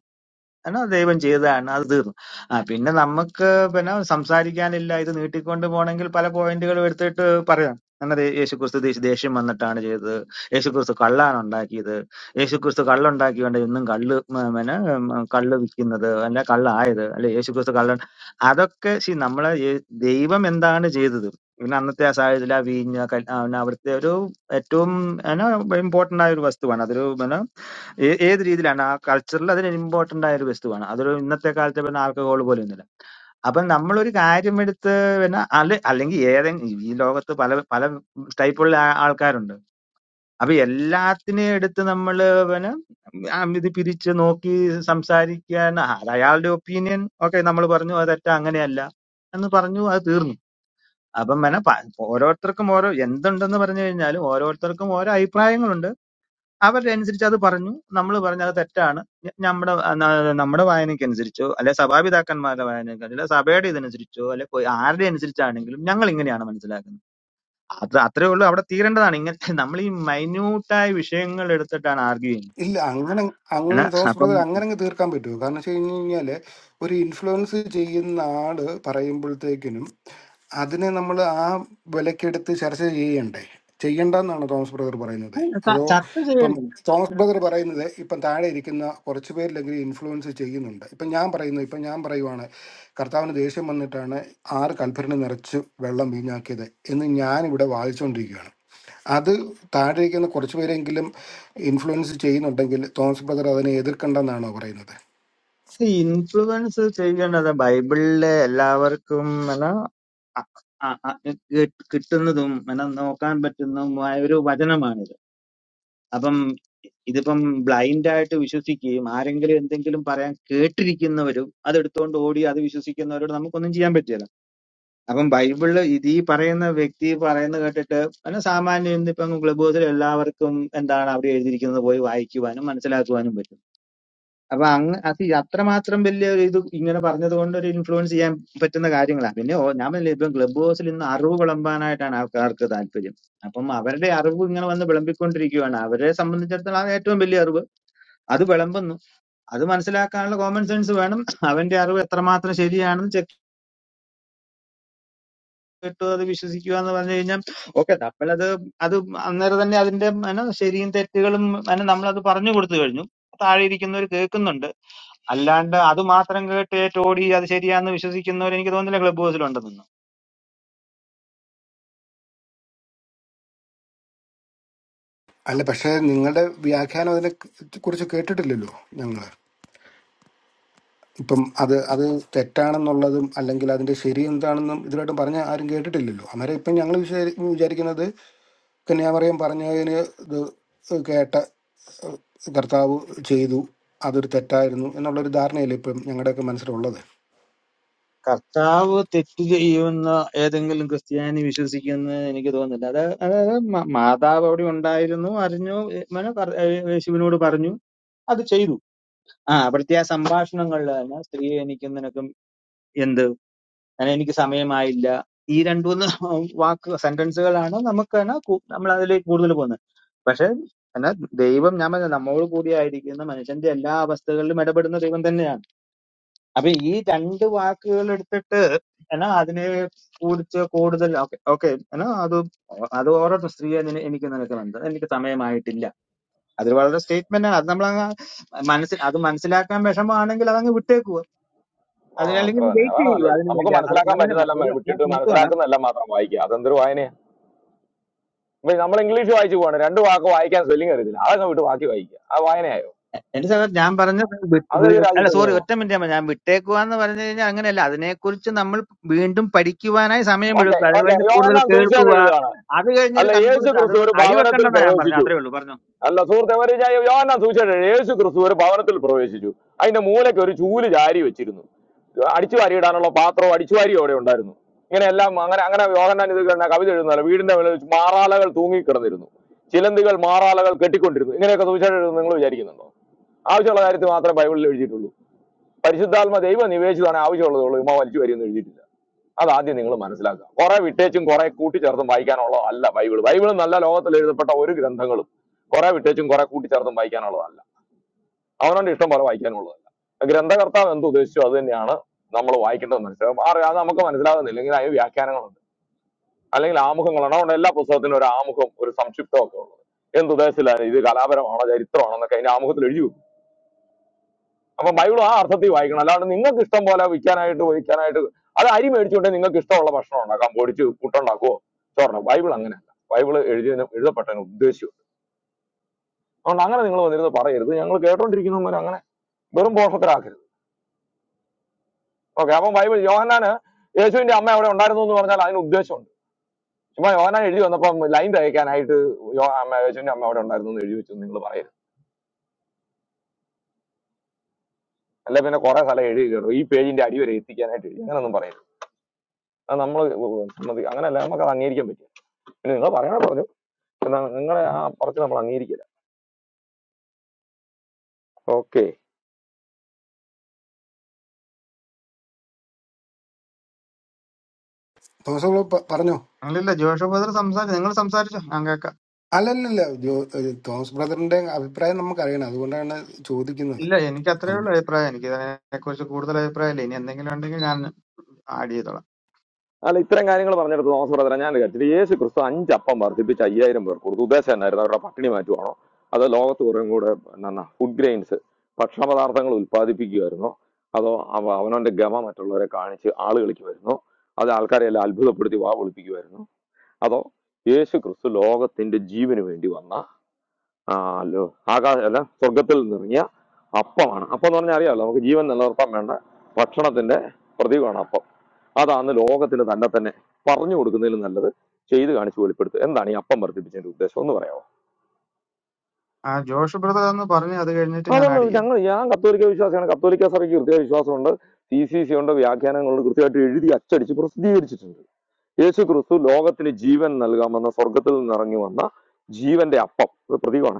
Speaker 3: എന്നാ ദൈവം ചെയ്തതാണ് അത് തീർന്നു ആ പിന്നെ നമുക്ക് പിന്നെ സംസാരിക്കാനില്ല ഇത് നീട്ടിക്കൊണ്ട് പോകണമെങ്കിൽ പല പോയിന്റുകൾ എടുത്തിട്ട് പറയാം എന്നാൽ യേശുക്രിസ്തു ദേശ- ദേഷ്യം വന്നിട്ടാണ് ചെയ്തത് യേശുക്രിസ്തു കള്ളാണ് ഉണ്ടാക്കിയത് യേശുക്രിസ്തു കള്ളുണ്ടാക്കിക്കൊണ്ട് ഇന്നും കള്ള് മ- പിന്നെ ഉം, കള്ള് വിൽക്കുന്നത് അല്ല കള്ളായത് അല്ലെ യേശുക്രിസ്തു കള്ള അതൊക്കെ ശി നമ്മളെ യേ- ദൈവം എന്താണ് ചെയ്തത് പിന്നെ അന്നത്തെ ആ സാഹചര്യത്തിൽ ആ വീഞ്ഞ കൽ- ആ, പിന്നെ അവിടുത്തെ ഒരു ഏറ്റവും ഇമ്പോർട്ടന്റ് ആയ ഒരു വസ്തുവാണ് അതൊരു ഏ- ഏത് രീതിയിലാണ് ആ കൾച്ചറിൽ അതിന് ഇമ്പോർട്ടന്റ് ആയ ഒരു വസ്തുവാണ് അതൊരു ഇന്നത്തെ കാലത്തെ പിന്നെ ആൽക്കഹോൾ പോലെ ഒന്നുമില്ല അപ്പൊ നമ്മളൊരു കാര്യം എടുത്ത് പിന്നെ അല്ലെ അല്ലെങ്കിൽ ഏതെങ്കിലും ഈ ലോകത്ത് പല പല ടൈപ്പുള്ള ആ- ആൾക്കാരുണ്ട് അപ്പൊ എല്ലാത്തിനെയും എടുത്ത് നമ്മൾ പിന്നെ ആ ഇത് പിരിച്ച് നോക്കി സംസാരിക്കാൻ ആ, അത് അയാളുടെ ഒപ്പീനിയൻ ഓക്കെ നമ്മൾ പറഞ്ഞു അത് തെറ്റാ അങ്ങനെയല്ല എന്ന് പറഞ്ഞു അത് തീർന്നു അപ്പം പിന്നെ പ- ഓരോരുത്തർക്കും ഓരോ എന്തുണ്ടെന്ന് പറഞ്ഞു കഴിഞ്ഞാലും ഓരോരുത്തർക്കും ഓരോ അഭിപ്രായങ്ങളുണ്ട് അവരനുസരിച്ച് അത് പറഞ്ഞു നമ്മൾ പറഞ്ഞു അത് തെറ്റാണ് ഞ- നമ്മുടെ ആ, ന- നമ്മുടെ വായനയ്ക്കനുസരിച്ചോ അല്ലെ സഭാപിതാക്കന്മാരുടെ വായനയ്ക്ക് അല്ലെ സഭയുടെ ഇതനുസരിച്ചോ അല്ലെ കൊ- ആരുടെ അനുസരിച്ചാണെങ്കിലും ഞങ്ങൾ ഇങ്ങനെയാണ് മനസ്സിലാക്കുന്നത് അത് അത്രേ ഉള്ളൂ അവിടെ തീരേണ്ടതാണ് ഇങ്ങനത്തെ നമ്മൾ ഈ മൈന്യൂട്ടായ വിഷയങ്ങൾ എടുത്തിട്ടാണ് ആർഗ്യൂ ചെയ്യുന്നത്
Speaker 1: ഇല്ല അങ്ങനെ
Speaker 3: ആണ്.
Speaker 1: അങ്ങനെ തോമസ്
Speaker 3: അപ്പം
Speaker 1: ബ്രദർ അങ്ങനെ അങ്ങ് തീർക്കാൻ പറ്റുമോ കാരണം വെച്ച് കഴിഞ്ഞ് കഴിഞ്ഞാല് ഒരു ഇൻഫ്ലുവൻസ് ചെയ്യുന്ന ആള് പറയുമ്പോഴത്തേക്കിനും അതിനെ നമ്മൾ ആ വിലക്കെടുത്ത് ചർച്ച ചെയ്യണ്ടേ ചെയ്യണ്ടെന്നാണ് തോമസ് ബ്രദർ പറയുന്നത്
Speaker 3: ച-
Speaker 1: അതോ
Speaker 3: ചർച്ച
Speaker 1: ഇപ്പം
Speaker 3: ചെയ്യണം
Speaker 1: തോമസ് ബ്രദർ പറയുന്നത് ഇപ്പം താഴെ ഇരിക്കുന്ന കുറച്ച് പേരിലെങ്കിലും ഇൻഫ്ലുവൻസ് ചെയ്യുന്നുണ്ട് ഇപ്പം ഞാൻ പറയുന്നു ഇപ്പം ഞാൻ പറയുവാണ് കർത്താവിന് ദേഷ്യം വന്നിട്ടാണ് ആറ് കൽപ്പരണി നിറച്ച് വെള്ളം വീഞ്ഞാക്കിയത് എന്ന് ഞാൻ ഇവിടെ വാദിച്ചുകൊണ്ടിരിക്കുകയാണ് അത് താഴെ ഇരിക്കുന്ന കുറച്ച് പേരെങ്കിലും ഇൻഫ്ലുവൻസ് ചെയ്യുന്നുണ്ടെങ്കിൽ തോമസ് ബ്രദർ അതിനെ എതിർക്കണ്ടെന്നാണോ പറയുന്നത്
Speaker 3: ഇൻഫ്ലുവൻസ് ചെയ്യേണ്ടത് ബൈബിളിലെ എല്ലാവർക്കും എന്നാ അ- അ- അ- കി- കിട്ടുന്നതും എന്നാ നോക്കാൻ പറ്റുന്നതുമായ ഒരു വചനമാണിത് അപ്പം ഇതിപ്പം ബ്ലൈൻഡ് ആയിട്ട് വിശ്വസിക്കുകയും ആരെങ്കിലും എന്തെങ്കിലും പറയാൻ കേട്ടിരിക്കുന്നവരും അതെടുത്തുകൊണ്ട് ഓടി അത് വിശ്വസിക്കുന്നവരോട് നമുക്കൊന്നും ചെയ്യാൻ പറ്റില്ല അപ്പം ബൈബിള് ഇത് ഈ പറയുന്ന വ്യക്തി പറയുന്ന കേട്ടിട്ട് പിന്നെ സാമാന്യം ഇന്നിപ്പം ക്ലബ് ഹൗസിൽ എല്ലാവർക്കും എന്താണ് അവിടെ എഴുതിയിരിക്കുന്നത് പോയി വായിക്കുവാനും മനസ്സിലാക്കുവാനും പറ്റും അപ്പൊ അങ്ങ് അത് ഈ അത്രമാത്രം വലിയ ഒരു ഇത് ഇങ്ങനെ പറഞ്ഞത് കൊണ്ട് ഒരു ഇൻഫ്ലുവൻസ് ചെയ്യാൻ പറ്റുന്ന കാര്യങ്ങളാണ് പിന്നെ ഓ- ഞാൻ പറഞ്ഞില്ലേ ഇപ്പം ക്ലബ് ഹൗസിൽ ഇന്ന് അറിവ് വിളമ്പാനായിട്ടാണ് ആൾക്കാർക്ക് താല്പര്യം അപ്പം അവരുടെ അറിവ് ഇങ്ങനെ വന്ന് വിളമ്പിക്കൊണ്ടിരിക്കുകയാണ് അവരെ സംബന്ധിച്ചിടത്തോളം അത് ഏറ്റവും വലിയ അറിവ് അത് വിളമ്പുന്നു അത് മനസ്സിലാക്കാനുള്ള കോമൺ സെൻസ് വേണം അവന്റെ അറിവ് എത്രമാത്രം ശരിയാണെന്ന് ചെക്ക് ചെയ്തിട്ട് അത് വിശ്വസിക്കുക എന്ന് പറഞ്ഞു കഴിഞ്ഞാൽ ഓക്കെ നമ്മളത് അത് അന്നേരം തന്നെ അതിന്റെ എന്നാ ശരിയും തെറ്റുകളും എന്നാ നമ്മളത് പറഞ്ഞു കൊടുത്തു കഴിഞ്ഞു താഴെ ഇരിക്കുന്നവർ കേൾക്കുന്നുണ്ട് അല്ലാണ്ട് അത് മാത്രം കേട്ട് ഏറ്റോടി അത് ശരിയാന്ന് വിശ്വസിക്കുന്നവർ എനിക്ക് തോന്നുന്നില്ല ക്ലബ് ഹൗസിലുണ്ടെന്ന്
Speaker 1: അല്ല പക്ഷേ നിങ്ങളുടെ വ്യാഖ്യാനം അതിനെ കുറിച്ച് കേട്ടിട്ടില്ലല്ലോ ഞങ്ങൾ ഇപ്പം അത് അത് തെറ്റാണെന്നുള്ളതും അല്ലെങ്കിൽ അതിന്റെ ശരി എന്താണെന്നും ഇതുവരായിട്ടും പറഞ്ഞ ആരും കേട്ടിട്ടില്ലല്ലോ അന്നേരം ഇപ്പം ഞങ്ങൾ വിചാരിക്കുന്നത് കന്യാമറിയം പറഞ്ഞതിന് ഇത് കേട്ട ഏഹ്, കർത്താവ് ചെയ്തു അതൊരു തെറ്റായിരുന്നു എന്നുള്ളൊരു ധാരണയല്ലേ ഇപ്പം ഞങ്ങളുടെയൊക്കെ മനസ്സിലുള്ളത്
Speaker 3: കർത്താവ് തെറ്റ് ചെയ്യുമെന്ന് ഏതെങ്കിലും ക്രിസ്ത്യാനി വിശ്വസിക്കുന്നത് എനിക്ക് തോന്നുന്നില്ല അത് അതായത് മ- മാതാവ് അവിടെ ഉണ്ടായിരുന്നു അറിഞ്ഞു ഏ, മനു പറ- ഏ, യേശുവിനോട് പറഞ്ഞു അത് ചെയ്തു ആ അവിടുത്തെ ആ സംഭാഷണങ്ങളിൽ തന്നെ സ്ത്രീയെ എനിക്കും നിനക്കും എന്ത് അങ്ങനെ എനിക്ക് സമയമായില്ല ഈ രണ്ടു മൂന്ന് വാക്ക് സെന്റൻസുകളാണ് നമുക്ക് തന്നെ നമ്മൾ അതിലേക്ക് കൂടുതൽ പോകുന്നത് പക്ഷെ എന്നാ ദൈവം ഞാൻ പറഞ്ഞ നമ്മോട് കൂടിയായിരിക്കുന്ന മനുഷ്യന്റെ എല്ലാ അവസ്ഥകളിലും ഇടപെടുന്ന ദൈവം തന്നെയാണ് അപ്പൊ ഈ രണ്ട് വാക്കുകൾ എടുത്തിട്ട് എന്നാ അതിനെ കുറിച്ച് കൂടുതൽ ഓക്കെ ഓക്കെ എന്നാ അത് അത് ഓരോരുത്തർ സ്ത്രീയെ നിന- എനിക്ക് നിനക്ക് മനസ്സിൽ എനിക്ക് സമയമായിട്ടില്ല അത് വളരെ സ്റ്റേറ്റ്മെന്റ് ആണ് അത് നമ്മൾ മനസ്സിൽ അത് മനസ്സിലാക്കാൻ വിഷമമാണെങ്കിൽ അതങ്ങ് വിട്ടേക്കുക
Speaker 4: ആ അത്ര
Speaker 3: അതിനല്ലെങ്കിൽ
Speaker 4: തന്നെ
Speaker 3: വെയിറ്റ്
Speaker 4: അതാണ്
Speaker 3: ചെയ്യുക
Speaker 4: നല്ലത്
Speaker 3: അതിനു
Speaker 4: നമുക്ക്
Speaker 3: വേണ്ടി അത്
Speaker 4: മനസ്സിലാക്കാൻ
Speaker 3: ഞാൻ പറഞ്ഞ
Speaker 4: പറ്റുന്നതെല്ലാം
Speaker 3: ഒരു
Speaker 4: മ-
Speaker 3: ഞാൻ
Speaker 4: വിട്ടിട്ട്
Speaker 3: നിർത്തുവാണ്
Speaker 4: മനസ്സിലാക്കുന്നതെല്ലാം മാത്രം വായിക്കുക അതെന്തൊരു വായനയാ ഇപ്പൊ നമ്മൾ ഇംഗ്ലീഷ് വായിച്ചു പോകണം രണ്ട് വാക്ക് വായിക്കാൻ സ്പെല്ലിംഗ് അറിയത്തില്ല അതൊക്കെ വിട്ട് ബാക്കി വായിക്കുക അത് വായനയായോ
Speaker 3: എന്റെ സമയത്ത് ഞാൻ പറഞ്ഞ വിട്ട്
Speaker 4: അതേത്
Speaker 3: വീ- അല്ല
Speaker 4: രാജ്യത്തെ
Speaker 3: സോറി
Speaker 4: നിയമം
Speaker 3: ഒറ്റ മിനിറ്റ് ഞാൻ പറഞ്ഞു. ഞാൻ വിട്ടേക്കുക എന്ന് പറഞ്ഞു കഴിഞ്ഞാൽ അങ്ങനെയല്ല അതിനെക്കുറിച്ച് നമ്മൾ വീണ്ടും പഠിക്കുവാനായി
Speaker 4: ഓക്കെ
Speaker 3: സമയമെടുക്കുക
Speaker 4: ഓക്കെ
Speaker 3: അതിനുവേണ്ടി കൂടുതൽ
Speaker 4: യോഹന്നാൻ സൂചിച്ചാണ്
Speaker 3: കേൾക്കുക
Speaker 4: എഴുതുകയാണ്
Speaker 3: അത് കഴിഞ്ഞൊരു
Speaker 4: അല്ല യേശു
Speaker 3: കൺക്ലൂഷൻ
Speaker 4: ക്രിസ്തു
Speaker 3: അതുകൊണ്ട്
Speaker 4: ഒരു ഭവനത്തിൽ
Speaker 3: അടിവെക്കണ്ടെന്നാ ഞാൻ പറഞ്ഞു
Speaker 4: പ്രവേശിച്ചു
Speaker 3: അത്രേ ഉള്ളൂ പറഞ്ഞു
Speaker 4: അല്ല സുഹൃത്തെ ഒരു യോഹന്നാൻ സൂക്ഷിച്ചിട്ട് യേശു ക്രിസ്തു ഒരു ഭവനത്തിൽ പ്രവേശിച്ചു അതിന്റെ മൂലയ്ക്ക് ഒരു ചൂല് ചാരി വെച്ചിരുന്നു അടിച്ചു വാരിയിടാനുള്ള പാത്രവും അടിച്ചു വാരിയും അവിടെ ഉണ്ടായിരുന്നു ഇങ്ങനെ എല്ലാം അങ്ങനെ അങ്ങനെ യോഹന്നാൻ ഇത് കണ്ട കവിത എഴുതുന്നല്ല വീടിന്റെ മേലെ വെച്ച് മാറാലകൾ തൂങ്ങിക്കിടന്നിരുന്നു ചിലന്തികൾ മാറാലകൾ കെട്ടിക്കൊണ്ടിരുന്നു ഇങ്ങനെയൊക്കെ സൂക്ഷിച്ചിട്ട് നിങ്ങൾ വിചാരിക്കുന്നുണ്ടോ ആവശ്യമുള്ള കാര്യത്തിൽ മാത്രമേ ബൈബിളിൽ എഴുതിയിട്ടുള്ളൂ പരിശുദ്ധാത്മ ദൈവം നിവേശിതാണ് ആവശ്യമുള്ളതുള്ളൂ ഉമ്മ വലിച്ചു വരിയെന്ന് എഴുതിയിട്ടില്ല അതാദ്യം നിങ്ങൾ മനസ്സിലാക്കുക കുറെ വിട്ടേച്ചും കുറെ കൂട്ടിച്ചേർത്തും വായിക്കാനുള്ള അല്ല ബൈബിൾ ബൈബിൾ നല്ല ലോകത്തിൽ എഴുതപ്പെട്ട ഒരു ഗ്രന്ഥങ്ങളും കുറെ വിട്ടേച്ചും കുറെ കൂട്ടിച്ചേർത്തും വായിക്കാനുള്ളതല്ല അവനവന്റെ ഇഷ്ടം പോലെ വായിക്കാനുള്ളതല്ല ഗ്രന്ഥകർത്താവ് എന്ത് ഉദ്ദേശിച്ചു അത് തന്നെയാണ് നമ്മൾ വായിക്കേണ്ടത് മനസ്സിലാവും ആ- അത് നമുക്ക് മനസ്സിലാകുന്നില്ല ഇങ്ങനെ അതിന് വ്യാഖ്യാനങ്ങളുണ്ട് അല്ലെങ്കിൽ ആമുഖങ്ങളാണ് അതുകൊണ്ട് എല്ലാ പുസ്തകത്തിനും ഒരു ആമുഖം ഒരു സംക്ഷിപ്തം ഒക്കെ ഉള്ളത് എന്തുദ്ദേശത്തിലാണ് ഇത് കലാപരമാണോ ചരിത്രമാണോ എന്നൊക്കെ അതിന്റെ ആമുഖത്തിൽ എഴുതി വെക്കും അപ്പൊ ബൈബിൾ ആ അർത്ഥത്തിൽ വായിക്കണം അല്ലാണ്ട് നിങ്ങൾക്ക് ഇഷ്ടം പോലെ വിൽക്കാനായിട്ട് ഒഴിക്കാനായിട്ട് അത് അരി മേടിച്ചുകൊണ്ട് നിങ്ങൾക്ക് ഇഷ്ടമുള്ള ഭക്ഷണം ഉണ്ടാക്കാം പൊടിച്ച് പുട്ടുണ്ടാക്കുവോ ചോറിനോ ബൈബിൾ അങ്ങനെയല്ല ബൈബിൾ എഴുതിയതിന് എഴുതപ്പെട്ടതിന് ഉദ്ദേശിച്ചു അതുകൊണ്ട് അങ്ങനെ നിങ്ങൾ വന്നിരുന്ന് പറയരുത് ഞങ്ങൾ കേട്ടോണ്ടിരിക്കുന്നവർ അങ്ങനെ വെറും പോഷത്തിലാക്കരുത് ഓക്കെ അപ്പം ബൈബിൾ യോഹന്നാന് യേശുവിന്റെ അമ്മ അവിടെ ഉണ്ടായിരുന്നു എന്ന് പറഞ്ഞാൽ അതിന് ഉദ്ദേശമുണ്ട് ചുമ്മാ യോഹന്നാൻ എഴുതി വന്നപ്പം ലൈൻ തയ്ക്കാനായിട്ട് യോ അമ്മ യേശുവിന്റെ അമ്മ അവിടെ ഉണ്ടായിരുന്നു എന്ന് എഴുതി വെച്ചു നിങ്ങൾ പറയരുത് അല്ലെ പിന്നെ കുറെ സ്ഥലം എഴുതി കയറും ഈ പേജിന്റെ അടി വരെ എത്തിക്കാനായിട്ട് എഴുതി അങ്ങനെയൊന്നും പറയരുത് അത് നമ്മൾ സമ്മതി അങ്ങനെയല്ല നമുക്ക് അത് അംഗീകരിക്കാൻ പറ്റും നിങ്ങൾ പറയണ പറഞ്ഞു എന്നാ നിങ്ങളെ ആ പറച്ചിൽ നമ്മൾ അംഗീകരിക്കില്ല ഓക്കെ
Speaker 1: തോമസ് ബ്രദർ പ- പറഞ്ഞോ
Speaker 3: അല്ലല്ല ജോഷോ ബ്രദർ സംസാരിച്ചു നിങ്ങൾ സംസാരിച്ചോ ഞാൻ കേൾക്കാം
Speaker 1: അല്ലല്ലല്ല ജോ ഏഹ് തോമസ് ബ്രദറിന്റെ അഭിപ്രായം നമുക്കറിയണം അതുകൊണ്ടാണ് ചോദിക്കുന്നത്
Speaker 3: ഇല്ല എനിക്ക് അത്രേ
Speaker 1: ഇപ്പം
Speaker 3: ഉള്ളൂ അഭിപ്രായം എനിക്ക് ഇതിനെ കുറിച്ച് കൂടുതൽ അഭിപ്രായം ഇല്ല ഇനി എന്തെങ്കിലും ഉണ്ടെങ്കിൽ ഞാൻ ആഡ് ചെയ്തോളാം
Speaker 4: അല്ല ഇത്തരം കാര്യങ്ങൾ പറഞ്ഞെടുത്ത് തോമസ് ബ്രദറെ ഞാൻ കരുതി യേശു ക്രിസ്തു അഞ്ചപ്പം വർദ്ധിപ്പിച്ച് അയ്യായിരം പേർക്ക് കൊടുത്തു ഉദ്ദേശം എന്നായിരുന്നു അവരുടെ പട്ടിണി മാറ്റുവാണോ അതോ ലോകത്ത് കുറേ കൂടെ എന്നാ ഫുഡ് ഗ്രെയിൻസ് ഭക്ഷണപദാർത്ഥങ്ങൾ ഉൽപ്പാദിപ്പിക്കുമായിരുന്നോ അതോ അവ- അവനവന്റെ ഗമ മറ്റുള്ളവരെ കാണിച്ച് ആളുകളിലേക്ക് വരുന്നു അത് ആൾക്കാരെ എല്ലാം അത്ഭുതപ്പെടുത്തി വാ വിളിപ്പിക്കുമായിരുന്നു അതോ യേശു ക്രിസ്തു ലോകത്തിന്റെ ജീവന് വേണ്ടി വന്ന ആ അല്ലോ ആകാശ അല്ല സ്വർഗത്തിൽ നിറങ്ങിയ അപ്പമാണ് അപ്പം എന്ന് പറഞ്ഞാൽ അറിയാമല്ലോ നമുക്ക് ജീവൻ നിലനിർത്താൻ വേണ്ട ഭക്ഷണത്തിന്റെ പ്രതീകമാണ് അപ്പം അതാണ് ലോകത്തിന് തന്നെ തന്നെ പറഞ്ഞു കൊടുക്കുന്നതിലും നല്ലത് ചെയ്ത് കാണിച്ച് വെളിപ്പെടുത്തുക എന്താണ് ഈ അപ്പം വർദ്ധിപ്പിച്ചതിന്റെ ഉദ്ദേശം ഒന്ന് പറയാമോ
Speaker 3: ആ ജോഷ് ബ്രദർ എന്ന് പറഞ്ഞു അത് കഴിഞ്ഞിട്ട് ഞാൻ
Speaker 4: അതാണ്
Speaker 3: ആഡ് ചെയ്യാം
Speaker 4: ഞങ്ങൾ ഞാൻ കത്തോലിക്ക വിശ്വാസിയാണ് കത്തോലിക്ക സഭയ്ക്ക് കൃത്യ വിശ്വാസമുണ്ട് സി സി സി ഉണ്ട് വ്യാഖ്യാനങ്ങളുണ്ട് കൃത്യമായിട്ട് എഴുതി അച്ചടിച്ച് പ്രസിദ്ധീകരിച്ചിട്ടുണ്ട് യേശു ക്രിസ്തു ലോകത്തിന് ജീവൻ നൽകാമെന്ന സ്വർഗത്തിൽ നിന്നിറങ്ങി വന്ന ജീവന്റെ അപ്പം ഒരു പ്രതീകമാണ്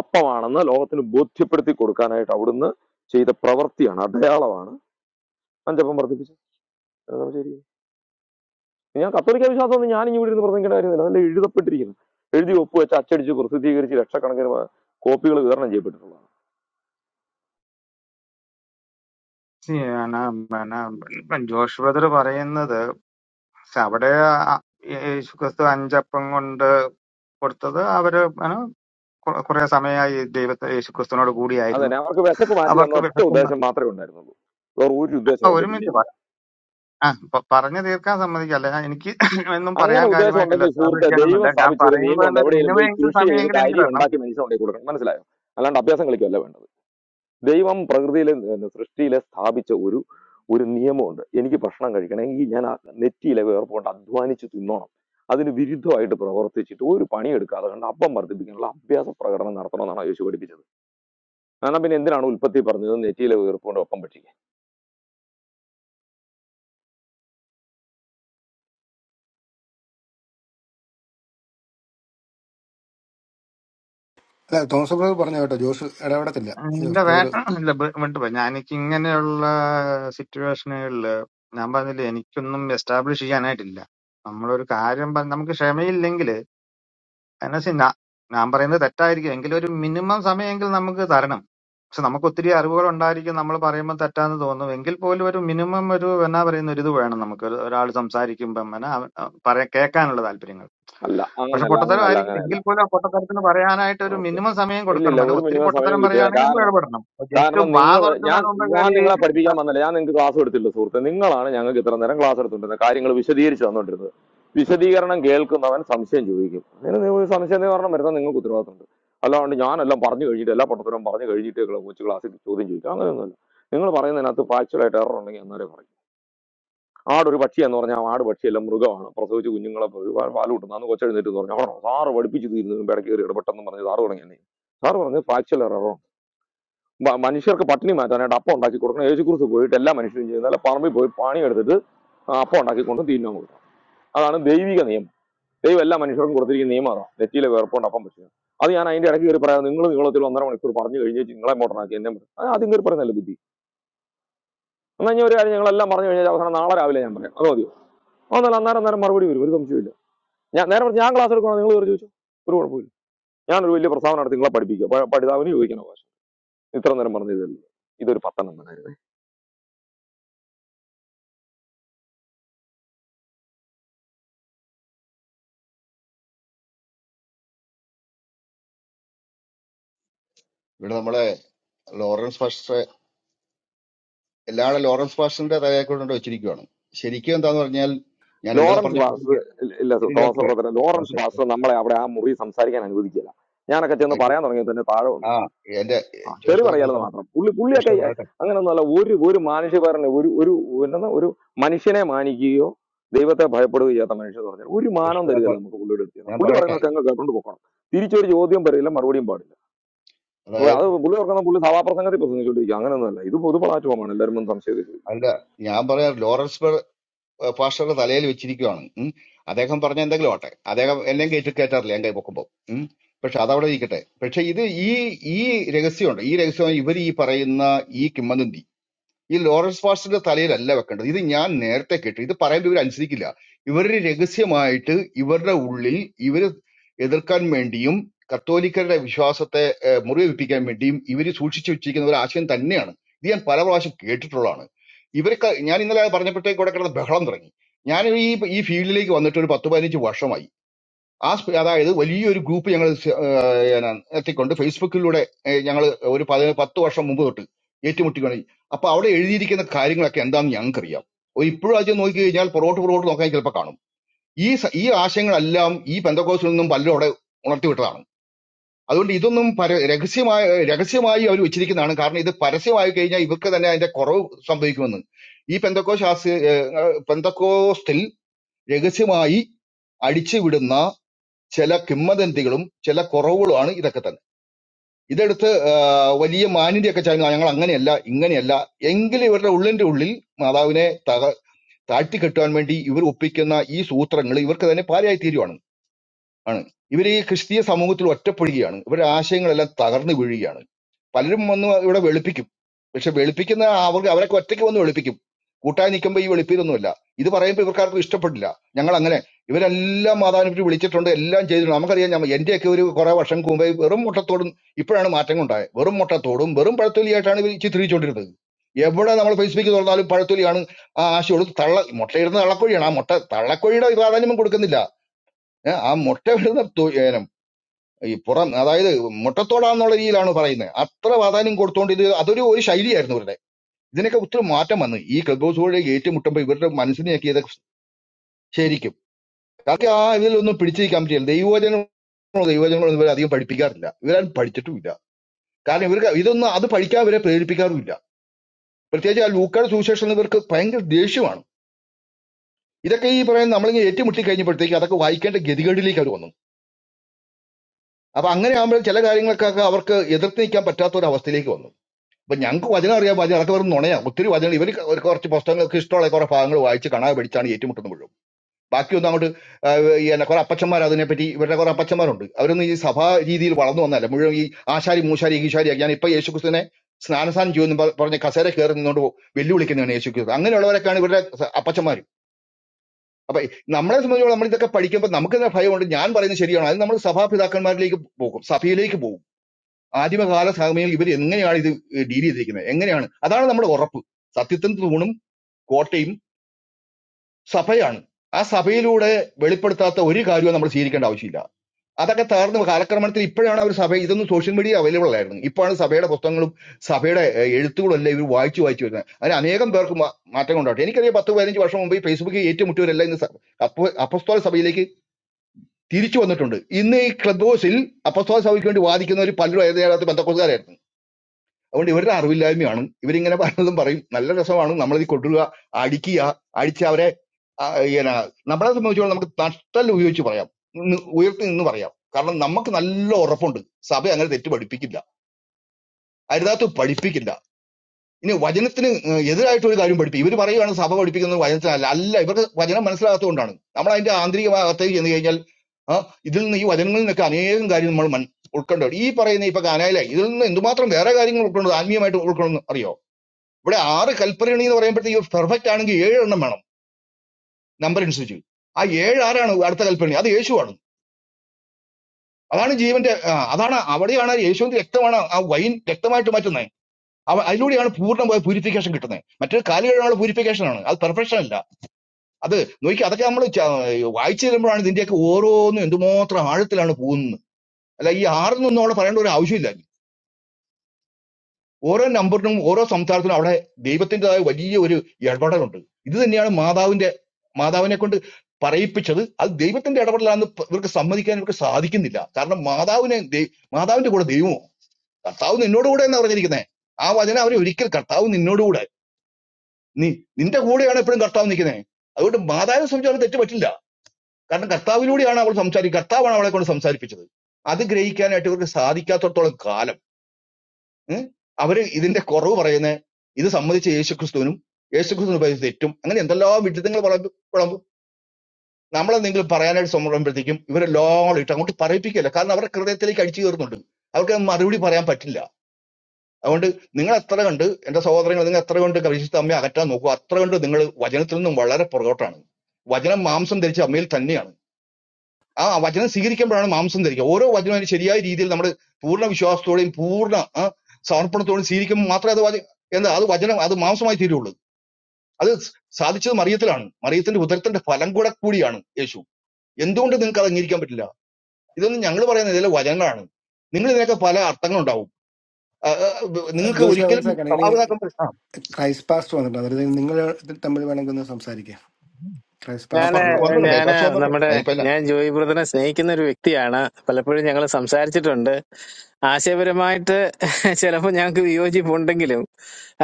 Speaker 4: അപ്പമാണെന്ന് ലോകത്തിന് ബോധ്യപ്പെടുത്തി കൊടുക്കാനായിട്ട് അവിടുന്ന് ചെയ്ത പ്രവൃത്തിയാണ് അടയാളമാണ് അഞ്ചപ്പം വർദ്ധിപ്പിച്ചത് അതാണ് ശരി ഞാൻ കത്തോലിക്ക വിശ്വാസമൊന്നും ഞാൻ ഇനി ഇവിടെ ഇരുന്ന് പ്രസംഗിക്കേണ്ട കാര്യമില്ല അതല്ല എഴുതപ്പെട്ടിരിക്കുന്നു എഴുതി ഒപ്പുവെച്ച് അച്ചടിച്ച് പ്രസിദ്ധീകരിച്ച് ലക്ഷക്കണക്കിന് കോപ്പികൾ വിതരണം ചെയ്യപ്പെട്ടിട്ടുള്ളതാണ്
Speaker 3: See, ഞാൻ- ഞാൻ- ജോഷ് ബ്രദർ പറയുന്നത് പക്ഷെ അവിടെ ആ യേശുക്രിസ്തു അഞ്ചപ്പം കൊണ്ട് കൊടുത്തത് അവര് ആണ് കൊ- കുറെ സമയമായി ദൈവത്തെ യേശുക്രിസ്തുവിനോട് കൂടിയായിരുന്നു
Speaker 4: അതന്നെ അവർക്ക് വിശപ്പ് മാറ്റുക എന്ന
Speaker 3: അവർക്ക്
Speaker 4: ഒറ്റ
Speaker 3: വിശക്കുന്ന
Speaker 4: ഉദ്ദേശം മാത്രമേ ഉണ്ടായിരുന്നുള്ളൂ വേറെ ഒരു ഉദ്ദേശം
Speaker 3: ആ,
Speaker 4: അതിന്റെ
Speaker 3: ഒരു മിനിറ്റ് പറ
Speaker 4: പിന്നിലില്ല
Speaker 3: ആ പ- പറഞ്ഞു തീർക്കാൻ സമ്മതിക്കല്ല ഞാൻ എനിക്ക് ഒന്നും
Speaker 4: അങ്ങനെ
Speaker 3: പറയാൻ
Speaker 4: ഉദ്ദേശം
Speaker 3: കാര്യമായിട്ടില്ല
Speaker 4: ഉണ്ടെങ്കിൽ
Speaker 3: എസ്റ്റാബ്ലിഷ്
Speaker 4: സുഹൃത്തെ
Speaker 3: ചെയ്യാനൊന്നുമില്ല
Speaker 4: ദൈവം
Speaker 3: ഞാൻ
Speaker 4: സ്ഥാപിച്ച ഒരു
Speaker 3: പറയുമ്പോൾ
Speaker 4: നിയമമുണ്ട്
Speaker 3: തന്നെ ഒരു
Speaker 4: എവിടെയെങ്കിലും
Speaker 3: മിനിമം
Speaker 4: പോയി
Speaker 3: എങ്കിലും
Speaker 4: കൃഷി ചെയ്ത്
Speaker 3: സമയമെങ്കിലും എനിക്ക്
Speaker 4: കാര്യം
Speaker 3: തരണം
Speaker 4: ഉണ്ടാക്കി മനുഷ്യൻ ഉണ്ടാക്കി കൊടുക്കണം മനസ്സിലായോ അല്ലാണ്ട് അഭ്യാസം കളിക്കുകയല്ല വേണ്ടത് ദൈവം പ്രകൃതിയിലെ പിന്നെ സൃഷ്ടിയിലെ സ്ഥാപിച്ച ഒരു ഒരു നിയമമുണ്ട് എനിക്ക് ഭക്ഷണം കഴിക്കണമെങ്കിൽ ഞാൻ ആ നെറ്റിയിലെ വേർപ്പുകൊണ്ട് അധ്വാനിച്ച് തിന്നോണം അതിന് വിരുദ്ധമായിട്ട് പ്രവർത്തിച്ചിട്ട് ഒരു പണിയെടുക്കാതെ കണ്ട് അപ്പം വർദ്ധിപ്പിക്കാനുള്ള അഭ്യാസ പ്രകടനം നടത്തണമെന്നാണ് യേശു പഠിപ്പിച്ചത് കാരണം പിന്നെ എന്തിനാണ് ഉൽപ്പത്തി പറഞ്ഞത് നെറ്റിയിലെ വീർപ്പുകൊണ്ട് ഒപ്പം പഠിക്കുക
Speaker 1: അല്ല തോമസ് ബ്രദർ പറഞ്ഞു കേട്ടോ ജോഷ് ഇടപെടത്തില്ല
Speaker 3: ഇല്ല
Speaker 1: ജോഷ്
Speaker 3: വേ
Speaker 1: ബ്രദർ
Speaker 3: ഇല്ല ബ- വിട്ടു പോയി. ഞാൻ എനിക്ക് ഇങ്ങനെയുള്ള സിറ്റുവേഷനുകളിൽ ഞാൻ പറഞ്ഞില്ല എനിക്കൊന്നും എസ്റ്റാബ്ലിഷ് ചെയ്യാനായിട്ടില്ല നമ്മളൊരു കാര്യം പറഞ്ഞ് നമുക്ക് ക്ഷമയില്ലെങ്കിൽ എന്നുവെച്ചാൽ ഞാൻ ഞാൻ പറയുന്നത് തെറ്റായിരിക്കും എങ്കിലും ഒരു മിനിമം സമയമെങ്കിൽ നമുക്ക് തരണം പക്ഷെ നമുക്ക് ഒത്തിരി അറിവുകൾ ഉണ്ടായിരിക്കും നമ്മൾ പറയുമ്പോൾ തെറ്റാന്ന് തോന്നും എങ്കിൽ പോലും ഒരു മിനിമം ഒരു എന്നാ പറയുന്ന ഒരു ഇത് വേണം നമുക്ക് ഒരാൾ സംസാരിക്കുമ്പം എന്നാ അവൻ- അഹ് പറയാ കേൾക്കാനുള്ള താല്പര്യങ്ങൾ
Speaker 4: അല്ല
Speaker 3: പക്ഷെ
Speaker 4: അങ്ങനെയല്ല
Speaker 3: പൊട്ടത്തരം
Speaker 4: അങ്ങനെയല്ല
Speaker 3: ആയിരിക്കും
Speaker 4: അങ്ങനെയല്ല
Speaker 3: എങ്കിൽ പോലും ആ പൊട്ടത്തരത്തിന് പറയാനായിട്ട് ഒരു
Speaker 4: ഓക്കെ
Speaker 3: മിനിമം സമയം കൊടുക്കണം
Speaker 4: ഇല്ലില്ല
Speaker 3: എന്നാ
Speaker 4: ഒരു
Speaker 3: ഒത്തിരി
Speaker 4: മിനിമം
Speaker 3: പൊട്ടത്തരം
Speaker 4: സമയം കിട്ടുക
Speaker 3: പറയുകയാണെങ്കിൽ
Speaker 4: കാരണം
Speaker 3: നമ്മൾ ഇടപെടണം ജസ്റ്റ്
Speaker 4: കാരണം
Speaker 3: വാ
Speaker 4: നിങ്ങൾ ഞാൻ
Speaker 3: തുറക്കുന്നതിന് മുമ്പ്
Speaker 4: ഞാൻ
Speaker 3: കയറി
Speaker 4: നിങ്ങളെ പഠിപ്പിക്കാൻ വന്നില്ല ഞാൻ നിങ്ങൾക്ക് ക്ലാസ് എടുത്തില്ല സുഹൃത്തെ നിങ്ങളാണ് ഞങ്ങൾക്ക് ഇത്ര നേരം ക്ലാസ് എടുത്തുകൊണ്ടിരുന്നത് കാര്യങ്ങൾ വിശദീകരിച്ച് തന്നുകൊണ്ടിരുന്നത് വിശദീകരണം കേൾക്കുന്നവൻ സംശയം ചോദിക്കും അങ്ങനെ നിങ്ങൾ ഒരു സംശയ നിവാരണം വരുത്താൻ നിങ്ങൾക്ക് ഉത്തരവാദിത്തമുണ്ട് അല്ലാണ്ട് ഞാനെല്ലാം പറഞ്ഞു കഴിഞ്ഞിട്ട് എല്ലാ പഠനത്തിനും പറഞ്ഞു കഴിഞ്ഞിട്ട് കൊച്ചു ക്ലാസ്സിൽ ചോദ്യം ചോദിക്കും അങ്ങനെയൊന്നുമില്ല നിങ്ങൾ പറയുന്നതിനകത്ത് ഫാക്ച്വലായിട്ട് എറർ ഉണ്ടെങ്കിൽ അന്നേരം പറയും ആടൊരു പക്ഷി എന്ന് പറഞ്ഞാൽ ആട് പക്ഷിയല്ല മൃഗമാണ് പ്രസവിച്ച് കുഞ്ഞുങ്ങളെ പോയി പാൽ പാൽ കിട്ടുന്ന അന്ന് കൊച്ചെഴുന്നേറ്റ് പറഞ്ഞു ആണോ സാറ് പഠിപ്പിച്ച് തീരുന്നതിന് ഇടയ്ക്ക് കയറി ഇടപെട്ടെന്ന് പറഞ്ഞ് സാറ് തുടങ്ങി എന്നെ സാറ് പറഞ്ഞ് ഫാക്ച്വൽ എറർ മ- മനുഷ്യർക്ക് പട്ടിണി മാറ്റാനായിട്ട് അപ്പം ഉണ്ടാക്കി കൊടുക്കണം യേശുക്രിസ്തു പോയിട്ട് എല്ലാ മനുഷ്യരും ചെയ്യുന്ന അല്ല പറമ്പിൽ പോയി പാണി എടുത്തിട്ട് ആ അപ്പം ഉണ്ടാക്കി കൊണ്ട് തീരുമാനം കൊടുക്കണം അതാണ് ദൈവിക നിയമം ദൈവം എല്ലാ മനുഷ്യർക്കും കൊടുത്തിരിക്കുന്ന നിയമം അതാണ് നെറ്റിയിലെ വേർപ്പുണ്ട് അപ്പം വെച്ചു അത് ഞാൻ അതിന്റെ ഇടയ്ക്ക് കയറി പറയാം നിങ്ങൾ നീളത്തിൽ ഒന്നര മണിക്കൂർ പറഞ്ഞു കഴിഞ്ഞ് നിങ്ങളെ മോട്ടറാക്കി എന്നെ മോഡ- അത് ആദ്യം കയറി പറയുന്നല്ലേ ബുദ്ധി എന്നാൽ ഞാൻ ഒരു കാര്യം ഞങ്ങളെല്ലാം പറഞ്ഞു കഴിഞ്ഞാൽ അവസാനം നാളെ രാവിലെ ഞാൻ പറയാം അത് മതിയോ എന്നാൽ അന്നേരം അന്നേരം മറുപടി വരും ഒരു സംശയമില്ല ഞാൻ നേരെ മറിച്ച് ഞാൻ ക്ലാസ് എടുക്കണോ നിങ്ങൾ കയറി ചോദിച്ചു ഒരു കുഴപ്പമില്ല ഞാനൊരു വലിയ പ്രസ്താവന നടത്തി നിങ്ങളെ പഠിപ്പിക്കുക പഠിതാവിന് ചോദിക്കണം അവകാശം ഇത്ര നേരം പറഞ്ഞു ഇതല്ല ഇതൊരു പത്തനം
Speaker 5: ഇവിടെ നമ്മളെ ലോറൻസ് ഫാസ്റ്ററെ എല്ലാവരും ലോറൻസ് ഫാസ്റ്ററിന്റെ തയ്യാറെടുപ്പ് വെച്ചിരിക്കുവാണ് ശരിക്കും എന്താന്ന് പറഞ്ഞാൽ ഞാൻ ഇന്നലെ
Speaker 4: ലോറൻസ്
Speaker 5: പറഞ്ഞ
Speaker 4: പാസ്റ്റർ ഇല്ല
Speaker 5: ഇത്
Speaker 4: തോമസ്
Speaker 5: കേൾക്കുക
Speaker 4: ബ്രദർ ലോറൻസ്
Speaker 5: ജോഷ്
Speaker 4: പാസ്റ്റർ നമ്മളെ അവിടെ ആ മുറി സംസാരിക്കാൻ അനുവദിക്കില്ല ഞാനൊക്കെ
Speaker 5: ആ,
Speaker 4: ചെന്ന്
Speaker 5: ഇത്
Speaker 4: പറയാൻ തുടങ്ങി തന്നെ താഴെ വന്നു
Speaker 5: ആ എന്റെ
Speaker 4: ആ
Speaker 5: ജോഷ്
Speaker 4: കയറി
Speaker 5: ബ്രദർ ഞാൻ
Speaker 4: പറയാലെന്ന്
Speaker 5: പറഞ്ഞു
Speaker 4: മാത്രം പുള്ളി പുള്ളിയൊക്കെ
Speaker 5: ജോഷ് പറയട്ടെ
Speaker 4: അങ്ങനെയൊന്നുമല്ല ഒരു ഒരു മനുഷ്യപരനെ ഒരു ഒരു എന്താ ഒരു മനുഷ്യനെ മാനിക്കുകയോ ദൈവത്തെ ഭയപ്പെടുകയോ ചെയ്യാത്ത മനുഷ്യൻ എന്ന് പറഞ്ഞാൽ ഒരു
Speaker 5: ജോഷ്
Speaker 4: മാനവും
Speaker 5: ബ്രദർ ഞാൻ
Speaker 4: തരികയില്ല
Speaker 5: പറ-
Speaker 4: നമുക്ക് പുള്ളിയുടെ അടുത്ത് ചെന്നാൽ.
Speaker 5: ഞാൻ
Speaker 4: പുള്ളി
Speaker 5: പറയട്ടെ
Speaker 4: പറയുന്നതൊക്കെ അങ്ങ് കേട്ടോണ്ട് പോക്കണം തിരിച്ചൊരു ചോദ്യം പറയില്ല മറുപടിയും പാടില്ല അപ്പൊ
Speaker 5: അതായത്
Speaker 4: അത് പുള്ളി ഓർക്കുന്ന പുള്ളി സഭാപ്രസംഗത്തിൽ പ്രസംഗിച്ചുകൊണ്ടിരിക്കും അങ്ങനെയൊന്നുമല്ല ഇത് പൊതു പ്ലാറ്റ്ഫോമാണ് എല്ലാവരും ഒന്ന് സംശയം
Speaker 5: അല്ല ഞാൻ പറയാം ലോറൻസ് ബർ- ഫാസ്റ്ററുടെ തലയിൽ വെച്ചിരിക്കുവാണ് ഉം. അദ്ദേഹം പറഞ്ഞ എന്തെങ്കിലും ആട്ടെ അദ്ദേഹം എല്ലാം കയറ്റി കയറ്റാറില്ല എന്റെ കൈ പൊക്കുമ്പോൾ പക്ഷെ അതവിടെ ഇരിക്കട്ടെ പക്ഷെ ഇത് ഈ ഈ രഹസ്യമുണ്ട് ഈ രഹസ്യം ഇവർ ഈ പറയുന്ന ഈ കിംവദന്തി ഈ ലോറൻസ് ഫാസ്റ്റിന്റെ തലയിലല്ല വെക്കേണ്ടത് ഇത് ഞാൻ നേരത്തെ കേട്ടു ഇത് പറയുമ്പോൾ ഇവർ അനുസരിക്കില്ല ഇവർ രഹസ്യമായിട്ട് ഇവരുടെ ഉള്ളിൽ ഇവർ എതിർക്കാൻ വേണ്ടിയും കത്തോലിക്കരുടെ വിശ്വാസത്തെ ഏഹ്, മുറിവേൽപ്പിക്കാൻ വേണ്ടിയും ഇവർ സൂക്ഷിച്ചു വെച്ചിരിക്കുന്ന ഒരു ആശയം തന്നെയാണ് ഇത് ഞാൻ പല പ്രാവശ്യം കേട്ടിട്ടുള്ളതാണ് ഇവർക്ക് ഞാൻ ഇന്നലെ പറഞ്ഞപ്പോഴത്തേക്ക് ഇവിടെ കിടന്ന് ബഹളം തുടങ്ങി ഞാൻ ഈ ഈ ഫീൽഡിലേക്ക് വന്നിട്ട് ഒരു പത്ത് പതിനഞ്ച് വർഷമായി ആ സ്പ- അതായത് വലിയൊരു ഗ്രൂപ്പ് ഞങ്ങൾ എത്തിക്കൊണ്ട് ഫേസ്ബുക്കിലൂടെ ഞങ്ങൾ ഒരു പതി- പത്ത് വർഷം മുമ്പ് തൊട്ട് ഏറ്റുമുട്ടിക്കൊണ്ട് അപ്പൊ അവിടെ എഴുതിയിരിക്കുന്ന കാര്യങ്ങളൊക്കെ എന്താണെന്ന് ഞങ്ങൾക്കറിയാം ഇപ്പോഴും അത് നോക്കി കഴിഞ്ഞാൽ പുറകോട്ട് പുറകോട്ട് നോക്കാൻ ചിലപ്പോൾ കാണും ഈ സ- ഈ ആശയങ്ങളെല്ലാം ഈ പെന്തക്കോസിൽ നിന്നും പലരും അവിടെ ഉണർത്തിവിട്ടതാണ് അതുകൊണ്ട് ഇതൊന്നും പര- രഹസ്യമായ രഹസ്യമായി അവർ വെച്ചിരിക്കുന്നതാണ് കാരണം ഇത് പരസ്യമായി കഴിഞ്ഞാൽ ഇവർക്ക് തന്നെ അതിന്റെ കുറവ് സംഭവിക്കുമെന്ന് ഈ പെന്തക്കോസ് പെന്തക്കോസ്റ്റിൽ രഹസ്യമായി അടിച്ചുവിടുന്ന ചില കിംവദന്തികളും ചില കുറവുകളുമാണ് ഇതൊക്കെ തന്നെ ഇതെടുത്ത് ആഹ്, വലിയ മാന്യതയൊക്കെ ചായ ഞങ്ങൾ അങ്ങനെയല്ല ഇങ്ങനെയല്ല എങ്കിൽ ഇവരുടെ ഉള്ളിന്റെ ഉള്ളിൽ മാതാവിനെ തക താഴ്ത്തിക്കെട്ടുവാൻ വേണ്ടി ഇവർ ഒപ്പിക്കുന്ന ഈ സൂത്രങ്ങൾ ഇവർക്ക് തന്നെ പാരയായി തീരുവാണ് ആണ് ഇവർ ഈ ക്രിസ്തീയ സമൂഹത്തിൽ ഒറ്റപ്പെടുകയാണ് ഇവരുടെ ആശയങ്ങളെല്ലാം തകർന്നു വീഴുകയാണ് പലരും വന്ന് ഇവിടെ വെളുപ്പിക്കും പക്ഷെ വെളുപ്പിക്കുന്ന അവർക്ക് അവരൊക്കെ ഒറ്റയ്ക്ക് വന്ന് വെളുപ്പിക്കും കൂട്ടായി നിൽക്കുമ്പോൾ ഈ വെളുപ്പിയതൊന്നുമല്ല ഇത് പറയുമ്പോൾ ഇവർക്കാർക്കും ഇഷ്ടപ്പെട്ടില്ല ഞങ്ങൾ അങ്ങനെ ഇവരെല്ലാം മാതാവിനെപ്പറ്റി വിളിച്ചിട്ടുണ്ട് എല്ലാം ചെയ്തിട്ടുണ്ട് നമുക്കറിയാം ഞാൻ എൻ്റെയൊക്കെ ഒരു കുറേ വർഷം മുമ്പേ വെറും മുട്ടത്തോടും ഇപ്പോഴാണ് മാറ്റങ്ങൾ ഉണ്ടായത് വെറും മുട്ടത്തോടും വെറും പഴത്തൊലിയായിട്ടാണ് ഇവർ ചിത്രീകരിച്ചുകൊണ്ടിരുന്നത് എവിടെ നമ്മൾ ഫേസ്ബുക്ക് തുറന്നാലും പഴത്തൊലിയാണ് ആ ആശയോട് തള്ള മുട്ടയിടുന്ന തള്ളക്കോഴിയാണ് ആ മുട്ട തള്ളക്കോഴിയുടെ പ്രാധാന്യം കൊടുക്കുന്നില്ല ഏ, ആ മുട്ട വിടുന്ന തു- ഏനം, ഈ പുറം അതായത് മുട്ടത്തോടാന്നുള്ള രീതിയിലാണ് പറയുന്നത് അത്ര പ്രാധാന്യം കൊടുത്തോണ്ട് ഇത് അതൊരു ഒരു ശൈലിയായിരുന്നു ഇവരുടെ ഇതിനൊക്കെ ഒത്തിരി മാറ്റം വന്നു ഈ ക്ലബ് ഹൗസുകളുടെ ഏറ്റുമുട്ടുമ്പോൾ ഇവരുടെ മനസ്സിനെയൊക്കെ ഇതൊക്കെ ശരിക്കും കാരണം ആ ഇതിലൊന്നും പിടിച്ചു നിൽക്കാൻ പറ്റില്ല ദൈവവചനങ്ങളോ ദൈവവചനങ്ങളോ ഒന്നും ഇവരെ അധികം പഠിപ്പിക്കാറില്ല ഇവരാരും പഠിച്ചിട്ടുമില്ല കാരണം ഇവർക്ക് ഇതൊന്നും അത് പഠിക്കാൻ ഇവരെ പ്രേരിപ്പിക്കാറുമില്ല പ്രത്യേകിച്ച് ആ ലൂക്കാട് സുവിശേഷം ഇവർക്ക് ഭയങ്കര ദേഷ്യമാണ് ഇതൊക്കെ ഈ പറയുന്ന നമ്മളിങ്ങനെ ഏറ്റുമുട്ടി കഴിഞ്ഞപ്പോഴത്തേക്ക് അതൊക്കെ വായിക്കേണ്ട ഗതികേടിലേക്ക് അവർ വന്നു അപ്പൊ അങ്ങനെ ആകുമ്പോൾ ചില കാര്യങ്ങൾക്കൊക്കെ അവർക്ക് എതിർത്ത് നിൽക്കാൻ പറ്റാത്ത ഒരു അവസ്ഥയിലേക്ക് വന്നു അപ്പം ഞങ്ങൾക്ക് വചനം അറിയാൻ വചനം അതൊക്കെ വെറും നുണയാ ഒത്തിരി വചനം ഇവർ കുറച്ച് പുസ്തകങ്ങൾക്ക് ഇഷ്ടമുള്ള കുറേ ഭാഗങ്ങൾ വായിച്ച് കണാ പിടിച്ചാണ് ഏറ്റുമുട്ടുന്നത് മുഴുവൻ ബാക്കിയൊന്നും അങ്ങോട്ട് ആ, ഈ എന്നെ കുറേ അപ്പച്ചന്മാർ അതിനെപ്പറ്റി ഇവരുടെ കുറേ അപ്പച്ചന്മാരുണ്ട് അവരൊന്നും ഈ സഭാ രീതിയിൽ വളർന്നു വന്നതല്ല മുഴുവൻ ഈ ആശാരി മൂശാരി ഈശാരി ഞാൻ ഇപ്പം യേശുക്രിസ്തുവിനെ സ്നാനസ്ഥാനം ചെയ്യുമെന്ന് പ- പറഞ്ഞ് കസേര കയറി നിന്നുകൊണ്ട് വെല്ലുവിളിക്കുന്നതാണ് യേശുക്രിസ്തു അങ്ങനെയുള്ളവരൊക്കെയാണ് ഇവരുടെ സ- അപ്പച്ചന്മാർ അപ്പൊ നമ്മളെ സംബന്ധിച്ചോളം നമ്മൾ ഇതൊക്കെ പഠിക്കുമ്പോൾ നമുക്ക് തന്നെ ഭയമുണ്ട് ഞാൻ പറയുന്നത് ശരിയാണോ അത് നമ്മൾ സഭാപിതാക്കന്മാരിലേക്ക് പോകും സഭയിലേക്ക് പോകും ആദിമകാല സാമ്യയിൽ ഇവർ എങ്ങനെയാണ് ഇത് ഡീൽ ചെയ്തിരിക്കുന്നത് എങ്ങനെയാണ് അതാണ് നമ്മുടെ ഉറപ്പ് സത്യത്തിന് തൂണും കോട്ടയും സഭയാണ് ആ സഭയിലൂടെ വെളിപ്പെടുത്താത്ത ഒരു കാര്യവും നമ്മൾ സ്വീകരിക്കേണ്ട ആവശ്യമില്ല അതൊക്കെ തകർന്ന് കാലക്രമണത്തിൽ ഇപ്പോഴാണ് അവർ സഭ ഇതൊന്നും സോഷ്യൽ മീഡിയ അവൈലബിൾ ആയിരുന്നു ഇപ്പോഴാണ് സഭയുടെ പുസ്തകങ്ങളും സഭയുടെ ഏഹ്, എഴുത്തുകളും എല്ലാം ഇവർ വായിച്ചു വായിച്ചു വരുന്നത് അങ്ങനെ അനേകം പേർക്ക് മാ- മാറ്റം ഉണ്ടാവട്ടെ എനിക്കറിയാം പത്ത് പതിനഞ്ച് വർഷം മുമ്പ് ഈ ഫേസ്ബുക്കിൽ ഏറ്റുമുട്ടിയവരെല്ലാം ഇന്ന് സ- അപ്പോ- അപ്പസ്തോല സഭയിലേക്ക് തിരിച്ചു വന്നിട്ടുണ്ട് ഇന്ന് ഈ ക്ലബ് ഹൗസിൽ അപ്പസ്തോല സഭയ്ക്ക് വേണ്ടി വാദിക്കുന്നവർ പലരും അതിനകത്ത് ബന്ധക്കോസുകാരായിരുന്നു അതുകൊണ്ട് ഇവരുടെ അറിവില്ലായ്മയാണ് ഇവരിങ്ങനെ പലതും പറയും നല്ല രസമാണ് നമ്മളിത് കൊട്ടുക അടിക്കുക അടിച്ച് അവരെ ആ, ഇങ്ങനെ നമ്മളെ സംബന്ധിച്ചോളം നമുക്ക് നട്ടൽ ഉപയോഗിച്ച് പറയാം ഇന്ന് ഉയർത്തി നിന്ന് പറയാം കാരണം നമുക്ക് നല്ല ഉറപ്പുണ്ട് സഭ അങ്ങനെ തെറ്റ് പഠിപ്പിക്കില്ല അരുതാത്ത് പഠിപ്പിക്കില്ല ഇനി വചനത്തിന് ഏഹ്, എതിരായിട്ട് ഒരു കാര്യം പഠിപ്പിക്കും ഇവർ പറയുകയാണ് സഭ പഠിപ്പിക്കുന്നത് വചനത്തിനല്ല അല്ല ഇവർക്ക് വചനം മനസ്സിലാകാത്തതുകൊണ്ടാണ് നമ്മൾ അതിന്റെ ആന്തരിക ഭാഗത്തേക്ക് ചെന്ന് കഴിഞ്ഞാൽ ആ, ഇതിൽ നിന്ന് ഈ വചനങ്ങളിൽ നിന്നൊക്കെ അനേകം കാര്യം നമ്മൾ ഉൾക്കൊണ്ടോ ഈ പറയുന്ന ഇപ്പൊ കാനായാലേ ഇതിൽ നിന്ന് എന്തുമാത്രം വേറെ കാര്യങ്ങൾ ഉൾക്കൊണ്ടത് ആത്മീയമായിട്ട് ഉൾക്കൊള്ളുന്നു അറിയോ ഇവിടെ ആറ് കൽപ്പരണി എന്ന് പറയുമ്പോഴത്തേക്ക് പെർഫെക്റ്റ് ആണെങ്കിൽ ഏഴ് എണ്ണം വേണം നമ്പർ അനുസരിച്ച് ആ ഏഴ് ആരാണ് അടുത്ത കൽപ്പരണി അത് യേശുവാണ് അതാണ് ജീവന്റെ ആ, അതാണ് അവിടെയാണ് യേശുവിന്റെ രക്തമാണ് ആ വൈൻ രക്തമായിട്ട് മാറ്റുന്നത് അവ- അതിലൂടെയാണ് പൂർണ്ണമായ പ്യൂരിഫിക്കേഷൻ കിട്ടുന്നത് മറ്റൊരു കാലുകളിലുള്ള പ്യൂരിഫിക്കേഷൻ ആണ് അത് പെർഫെക്ഷൻ അല്ല അത് നോക്കി അതൊക്കെ നമ്മൾ വായിച്ചു തരുമ്പോഴാണ് ഇതിന്റെയൊക്കെ ഓരോന്നും എന്തുമാത്രം ആഴത്തിലാണ് പോകുന്നത് അല്ല ഈ ആറിൽ നിന്നും അവിടെ പറയേണ്ട ഒരു ആവശ്യമില്ല ഓരോ നമ്പറിനും ഓരോ സംസാരത്തിനും അവിടെ ദൈവത്തിൻ്റെതായ വലിയ ഒരു ഇടപെടലുണ്ട് ഇത് തന്നെയാണ് മാതാവിന്റെ മാതാവിനെ കൊണ്ട് പറയിപ്പിച്ചത് അത് ദൈവത്തിന്റെ ഇടപെടലാണെന്ന് പ- ഇവർക്ക് സമ്മതിക്കാൻ ഇവർക്ക് സാധിക്കുന്നില്ല കാരണം മാതാവിനെ ദൈ- മാതാവിന്റെ കൂടെ ദൈവമോ കർത്താവ് നിന്നോട് കൂടെ എന്നാ പറഞ്ഞിരിക്കുന്നത് ആ വചനം അവരെ ഒരിക്കൽ കർത്താവ് നിന്നോട് കൂടെ നീ നിന്റെ കൂടെയാണ് എപ്പോഴും കർത്താവ് നിൽക്കുന്നത് അതുകൊണ്ട് മാതാവിനെ സംബന്ധിച്ച് തെറ്റ് പറ്റില്ല കാരണം കർത്താവിലൂടെയാണ് അവൾ സംസാരിക്കുക കർത്താവാണ് അവളെ കൊണ്ട് സംസാരിപ്പിച്ചത് അത് ഗ്രഹിക്കാനായിട്ട് ഇവർക്ക് സാധിക്കാത്തടത്തോളം കാലം ഏഹ്? അവര് ഇതിന്റെ കുറവ് പറയുന്നത് ഇത് സംബന്ധിച്ച് യേശുക്രിസ്തുവിനും യേശുക്രിസ്തുവിന് ഉപയോഗിച്ച് തെറ്റും അങ്ങനെ എന്തെല്ലാം വിഡിത്തങ്ങൾ വിളമ്പും വിളമ്പും നമ്മളെന്തെങ്കിലും പറയാനായിട്ട് സമ്മതിക്കുമ്പോഴത്തേക്കും ഇവരെല്ലാം ഇട്ട് അങ്ങോട്ട് പറയിപ്പിക്കില്ല കാരണം അവരുടെ ഹൃദയത്തിലേക്ക് അടിച്ചു കയറുന്നുണ്ട് അവർക്ക് അത് മറുപടി പറയാൻ പറ്റില്ല അതുകൊണ്ട് നിങ്ങൾ എത്ര കണ്ട് എന്റെ സഹോദരങ്ങൾ നിങ്ങൾ എത്ര കണ്ട് പരിശുദ്ധ അമ്മയെ അകറ്റാൻ നോക്കുക അത്ര കണ്ട് നിങ്ങൾ വചനത്തിൽ നിന്നും വളരെ പുറകോട്ടാണ് വചനം മാംസം ധരിച്ച അമ്മയിൽ തന്നെയാണ് ആ വചനം സ്വീകരിക്കുമ്പോഴാണ് മാംസം ധരിക്കുക ഓരോ വചനവും അതിന് ശരിയായ രീതിയിൽ നമ്മൾ പൂർണ്ണ വിശ്വാസത്തോടെയും പൂർണ്ണ ആ, സമർപ്പണത്തോടെയും സ്വീകരിക്കുമ്പോൾ മാത്രമേ അത് വച- എന്താ അത് വചനം അത് മാംസമായി തീരുള്ളൂ അത് സ് സാധിച്ചത് മറിയത്തിലാണ് മറിയത്തിന്റെ ഉദരത്തിന്റെ ഫലം കൂടെ കൂടിയാണ് യേശു എന്തുകൊണ്ട് നിങ്ങൾക്ക് അത് അംഗീകരിക്കാൻ പറ്റില്ല ഇതൊന്നും ഞങ്ങൾ പറയുന്ന ഇതിലെ വചനങ്ങളാണ് നിങ്ങൾ ഇതിനൊക്കെ പല അർത്ഥങ്ങളുണ്ടാവും ആ, ആ, നിങ്ങൾക്ക്
Speaker 1: ജോഷി ഒരു
Speaker 5: ഒരിക്കലും
Speaker 1: സെക്കൻഡ് ഇനി
Speaker 5: സഭാപിതാക്കൾ ആ
Speaker 1: ക്രൈസ്റ്റ് പാസ്റ്റർ വന്നിട്ടുണ്ട് അവർ നിങ്ങൾ തമ്മിൽ വേണമെങ്കിൽ ഒന്ന് സംസാരിക്കാം ക്രൈസ്റ്റ്
Speaker 5: ആ,
Speaker 6: ഞാന്
Speaker 1: പാസ്റ്റർ
Speaker 5: പറഞ്ഞോ വന്നോട്ടെ
Speaker 1: പറഞ്ഞ
Speaker 5: കൈ
Speaker 6: ഞാന്
Speaker 5: പാഷ വന്നോട്ടെ
Speaker 6: നമ്മുടെ
Speaker 5: അതിനിപ്പല്ല
Speaker 6: ഞാൻ ജോയി ബ്രദറിനെ സ്നേഹിക്കുന്ന ഒരു വ്യക്തിയാണ് പലപ്പോഴും ഞങ്ങൾ സംസാരിച്ചിട്ടുണ്ട് ആശയപരമായിട്ട് ചിലപ്പോൾ ഞങ്ങൾക്ക് വിയോജിപ്പുണ്ടെങ്കിലും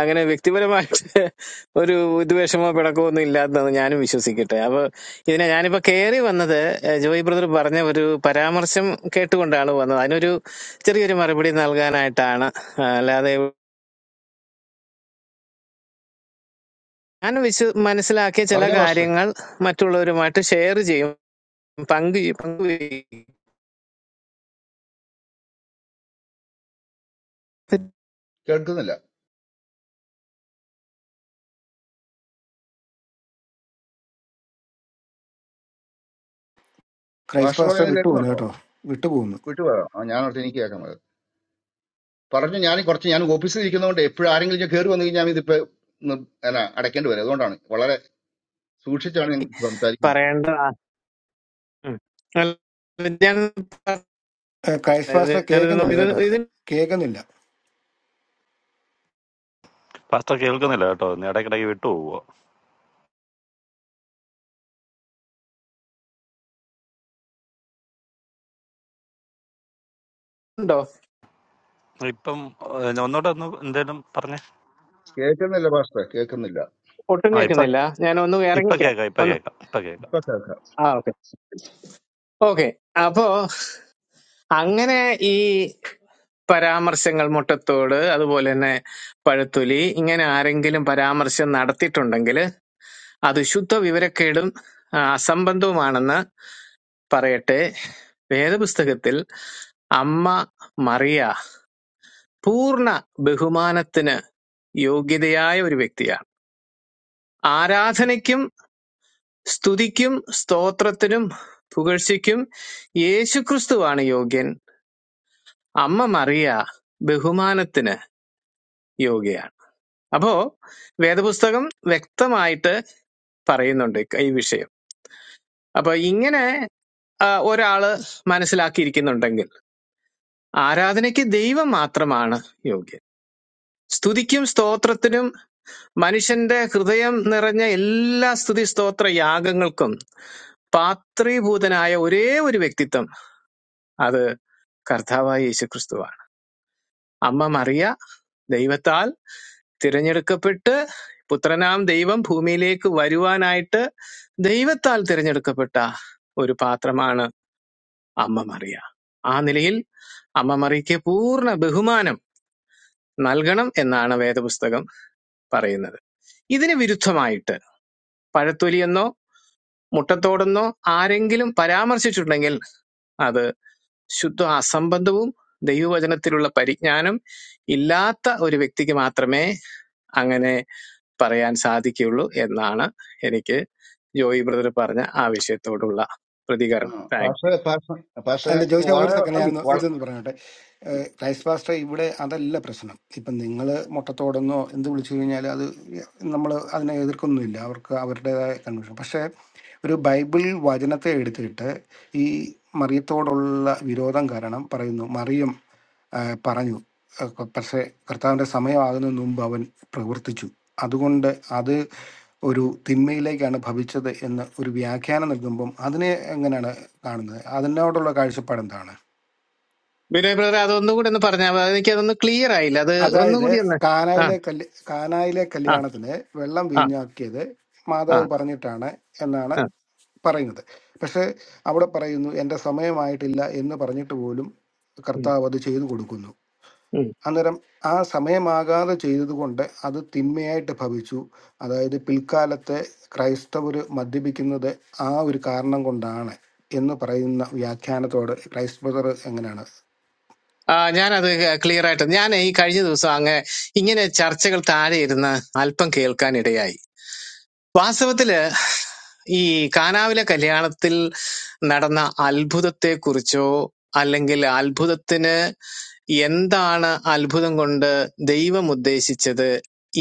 Speaker 6: അങ്ങനെ വ്യക്തിപരമായിട്ട് ഒരു വിദ്വേഷമോ പിണക്കമോ ഒന്നും ഇല്ലാത്തതെന്ന് ഞാനും വിശ്വസിക്കട്ടെ അപ്പൊ ഇതിനെ ഞാനിപ്പോ കയറി വന്നത് ഏഹ്, ജോയി ബ്രദർ പറഞ്ഞ ഒരു പരാമർശം കേട്ടുകൊണ്ടാണ് വന്നത് അതിനൊരു ചെറിയൊരു മറുപടി നൽകാനായിട്ടാണ് ആ, അല്ലാതെ ഞാൻ വിശ്വ മനസ്സിലാക്കിയ ചില
Speaker 5: പറഞ്ഞോ പാസ്റ്ററെ
Speaker 6: കാര്യങ്ങൾ മറ്റുള്ളവരുമായിട്ട് ഷെയർ ചെയ്യും പങ്കു പങ്കുവയ്ക്കും പിന്നെ
Speaker 5: കേൾക്കുന്നില്ല
Speaker 1: ക്രൈസ്റ്റ്
Speaker 5: പാഷ
Speaker 1: പാസ്റ്റർ
Speaker 5: പറയുന്നത്
Speaker 1: വിട്ടുപോകുന്നു
Speaker 5: കേൾക്കുന്നുണ്ടോ
Speaker 1: കേട്ടോ വിട്ടുപോകുന്നു
Speaker 5: വിട്ടു പറയാം ആ, ഞാൻ ഓർത്ത് എനിക്ക് കേൾക്കാം പറഞ്ഞു ഞാൻ കുറച്ച് ഞാൻ ഓഫീസിൽ ഇരിക്കുന്നതുകൊണ്ട് എപ്പോഴും ആരെങ്കിലും ഞാൻ കയറി വന്നു കഴിഞ്ഞാൽ ഇതിപ്പോ ഒന്ന് എന്നാ അടയ്ക്കേണ്ടി വരും അതുകൊണ്ടാണ് വളരെ സൂക്ഷിച്ചാണ് ഞാൻ സംസാരിക്കുന്നത്
Speaker 6: പറയേണ്ട ആ, ഉം. അല്ല, ഞാൻ
Speaker 1: ഏഹ് ക്രൈസ്റ്റ്
Speaker 6: പറഞ്ഞത്
Speaker 1: പാസ്റ്റർ
Speaker 6: ഞാനിത് നോ-
Speaker 1: കേൾക്കുന്നില്ല
Speaker 6: ഇത്
Speaker 1: കേട്ടോ
Speaker 6: ഇതുണ്ടോ
Speaker 1: കേൾക്കുന്നില്ല
Speaker 7: പാസ്റ്റർ കേൾക്കുന്നില്ല കേട്ടോ ഒന്ന് ഇടയ്ക്കിടയ്ക്ക് വിട്ടു പോവുക ഇപ്പം ഏഹ്, ഒന്നൂടെ ഒന്ന് എന്തേലും പറഞ്ഞേ
Speaker 5: കേൾക്കുന്നില്ല പാസ്റ്ററെ കേൾക്കുന്നില്ല
Speaker 6: ഒട്ടും
Speaker 7: ആ ഇപ്പൊ
Speaker 6: കേൾക്കുന്നില്ല ഞാൻ ഒന്ന്
Speaker 7: ഇപ്പൊ
Speaker 6: ഇറങ്ങിക്കാം
Speaker 7: കേക്കാം ഇപ്പൊ
Speaker 6: ഒന്ന്
Speaker 7: കേക്കാം ഇപ്പൊ കേക്കാം
Speaker 5: ഇപ്പൊ കേൾക്കാം
Speaker 6: ആ ഓക്കെ ഓക്കെ അപ്പോ അങ്ങനെ ഈ പരാമർശങ്ങൾ മുട്ടത്തോട് അതുപോലെ തന്നെ പഴുത്തൊലി ഇങ്ങനെ ആരെങ്കിലും പരാമർശം നടത്തിയിട്ടുണ്ടെങ്കിൽ അത് ശുദ്ധ വിവരക്കേടും ആ, അസംബന്ധവുമാണെന്ന് പറയട്ടെ വേദപുസ്തകത്തിൽ അമ്മ മറിയ പൂർണ്ണ ബഹുമാനത്തിന് യോഗ്യതയായ ഒരു വ്യക്തിയാണ് ആരാധനയ്ക്കും സ്തുതിക്കും സ്തോത്രത്തിനും പുകഴ്ചയ്ക്കും യേശുക്രിസ്തുവാണ് യോഗ്യൻ അമ്മ മറിയ ബഹുമാനത്തിന് യോഗ്യയാണ് അപ്പോ വേദപുസ്തകം വ്യക്തമായിട്ട് പറയുന്നുണ്ട് ഈ വിഷയം അപ്പൊ ഇങ്ങനെ ആ, ഒരാള് മനസ്സിലാക്കിയിരിക്കുന്നുണ്ടെങ്കിൽ ആരാധനയ്ക്ക് ദൈവം മാത്രമാണ് യോഗ്യൻ സ്തുതിക്കും സ്തോത്രത്തിനും മനുഷ്യന്റെ ഹൃദയം നിറഞ്ഞ എല്ലാ സ്തുതി സ്തോത്ര യാഗങ്ങൾക്കും പാത്രീഭൂതനായ ഒരേ ഒരു വ്യക്തിത്വം അത് കർത്താവായ യേശു ക്രിസ്തുവാണ് അമ്മ മറിയ ദൈവത്താൽ തിരഞ്ഞെടുക്കപ്പെട്ട് പുത്രനാം ദൈവം ഭൂമിയിലേക്ക് വരുവാനായിട്ട് ദൈവത്താൽ തിരഞ്ഞെടുക്കപ്പെട്ട ഒരു പാത്രമാണ് അമ്മ മറിയ ആ നിലയിൽ അമ്മ മറിയയ്ക്ക് പൂർണ്ണ ബഹുമാനം നൽകണം എന്നാണ് വേദപുസ്തകം പറയുന്നത് ഇതിന് വിരുദ്ധമായിട്ട് പഴത്തൊലിയെന്നോ മുട്ടത്തോടെന്നോ ആരെങ്കിലും പരാമർശിച്ചിട്ടുണ്ടെങ്കിൽ അത് ശുദ്ധ അസംബന്ധവും ദൈവവചനത്തിലുള്ള പരിജ്ഞാനം ഇല്ലാത്ത ഒരു വ്യക്തിക്ക് മാത്രമേ അങ്ങനെ പറയാൻ സാധിക്കുകയുള്ളൂ എന്നാണ് എനിക്ക് ജോയി ബ്രദർ പറഞ്ഞ ആ വിഷയത്തോടുള്ള
Speaker 5: ആ,
Speaker 6: പ്രതികരണം താങ്ക് യു
Speaker 5: പാസ്റ്ററെ പാസ്റ്ററെ പാസ്റ്ററെ
Speaker 1: അല്ല ജോഷി ഒരു
Speaker 5: വളരെ
Speaker 1: സെക്കൻഡ്
Speaker 5: നന്ദി
Speaker 1: ഞാൻ
Speaker 5: വള-
Speaker 1: ഇതൊന്ന് പറയട്ടെ ഏഹ് ക്രൈസ്റ്റ് പാസ്റ്റർ ഇവിടെ അതല്ല പ്രശ്നം ഇപ്പം നിങ്ങൾ മുട്ടത്തോടെന്നോ എന്ത് വിളിച്ചു കഴിഞ്ഞാൽ അത് നമ്മൾ അതിനെ എതിർക്കൊന്നുമില്ല അവർക്ക് അവരുടേതായ കൺവെൻഷൻ പക്ഷേ ഒരു ബൈബിൾ വചനത്തെ എടുത്തിട്ട് ഈ മറിയത്തോടുള്ള വിരോധം കാരണം പറയുന്നു മറിയം ആഹ്, പറഞ്ഞു ആഹ്, പക്ഷേ കർത്താവിൻ്റെ സമയമാകുന്നതിന് മുമ്പ് അവൻ പ്രവർത്തിച്ചു അതുകൊണ്ട് അത് ഒരു തിന്മയിലേക്കാണ് ഭവിച്ചത് എന്ന് ഒരു വ്യാഖ്യാനം നൽകുമ്പം അതിനെ എങ്ങനെയാണ് കാണുന്നത് അതിനോടുള്ള കാഴ്ചപ്പാട് എന്താണ്
Speaker 6: വിനോയ് ബ്രദർ അതൊന്നും കൂടി ഒന്ന് പറഞ്ഞാൽ മതി, എനിക്ക് അതൊന്ന് ക്ലിയർ ആയില്ല അത്
Speaker 1: അതായത്
Speaker 6: ഒന്നുകൂടി ഒന്ന് ആ
Speaker 1: കാനായിലെ കല്യ കാനായിലെ
Speaker 6: ആ
Speaker 1: കല്യാണത്തിന് വെള്ളം
Speaker 6: ആ
Speaker 1: വീഞ്ഞാക്കിയത്
Speaker 6: ആ
Speaker 1: മാതാവ് പറഞ്ഞിട്ടാണ് എന്നാണ്
Speaker 6: ആ
Speaker 1: പറയുന്നത് പക്ഷെ അവിടെ പറയുന്നു എൻ്റെ സമയമായിട്ടില്ല എന്ന് പറഞ്ഞിട്ട് പോലും
Speaker 6: ഉം,
Speaker 1: കർത്താവ് അത് ചെയ്തു കൊടുക്കുന്നു
Speaker 6: ഉം.
Speaker 1: അന്നേരം ആ സമയമാകാതെ ചെയ്തതുകൊണ്ട് അത് തിന്മയായിട്ട് ഭവിച്ചു അതായത് പിൽക്കാലത്തെ ക്രൈസ്തവർ മദ്യപിക്കുന്നത് ആ ഒരു കാരണം കൊണ്ടാണ് എന്ന് പറയുന്ന വ്യാഖ്യാനത്തോട് ക്രൈസ്തവർ എങ്ങനെയാണ്
Speaker 6: ആ, ഞാനത് ക്ലിയർ ആയിട്ട് ഞാൻ ഈ കഴിഞ്ഞ ദിവസം അങ്ങ് ഇങ്ങനെ ചർച്ചകൾ താഴെ ഇരുന്ന് അല്പം കേൾക്കാൻ ഇടയായി വാസ്തവത്തില് ഈ കാനാവിലെ കല്യാണത്തിൽ നടന്ന അത്ഭുതത്തെക്കുറിച്ചോ അല്ലെങ്കിൽ അത്ഭുതത്തിന് എന്താണ് അത്ഭുതം കൊണ്ട് ദൈവം ഉദ്ദേശിച്ചത്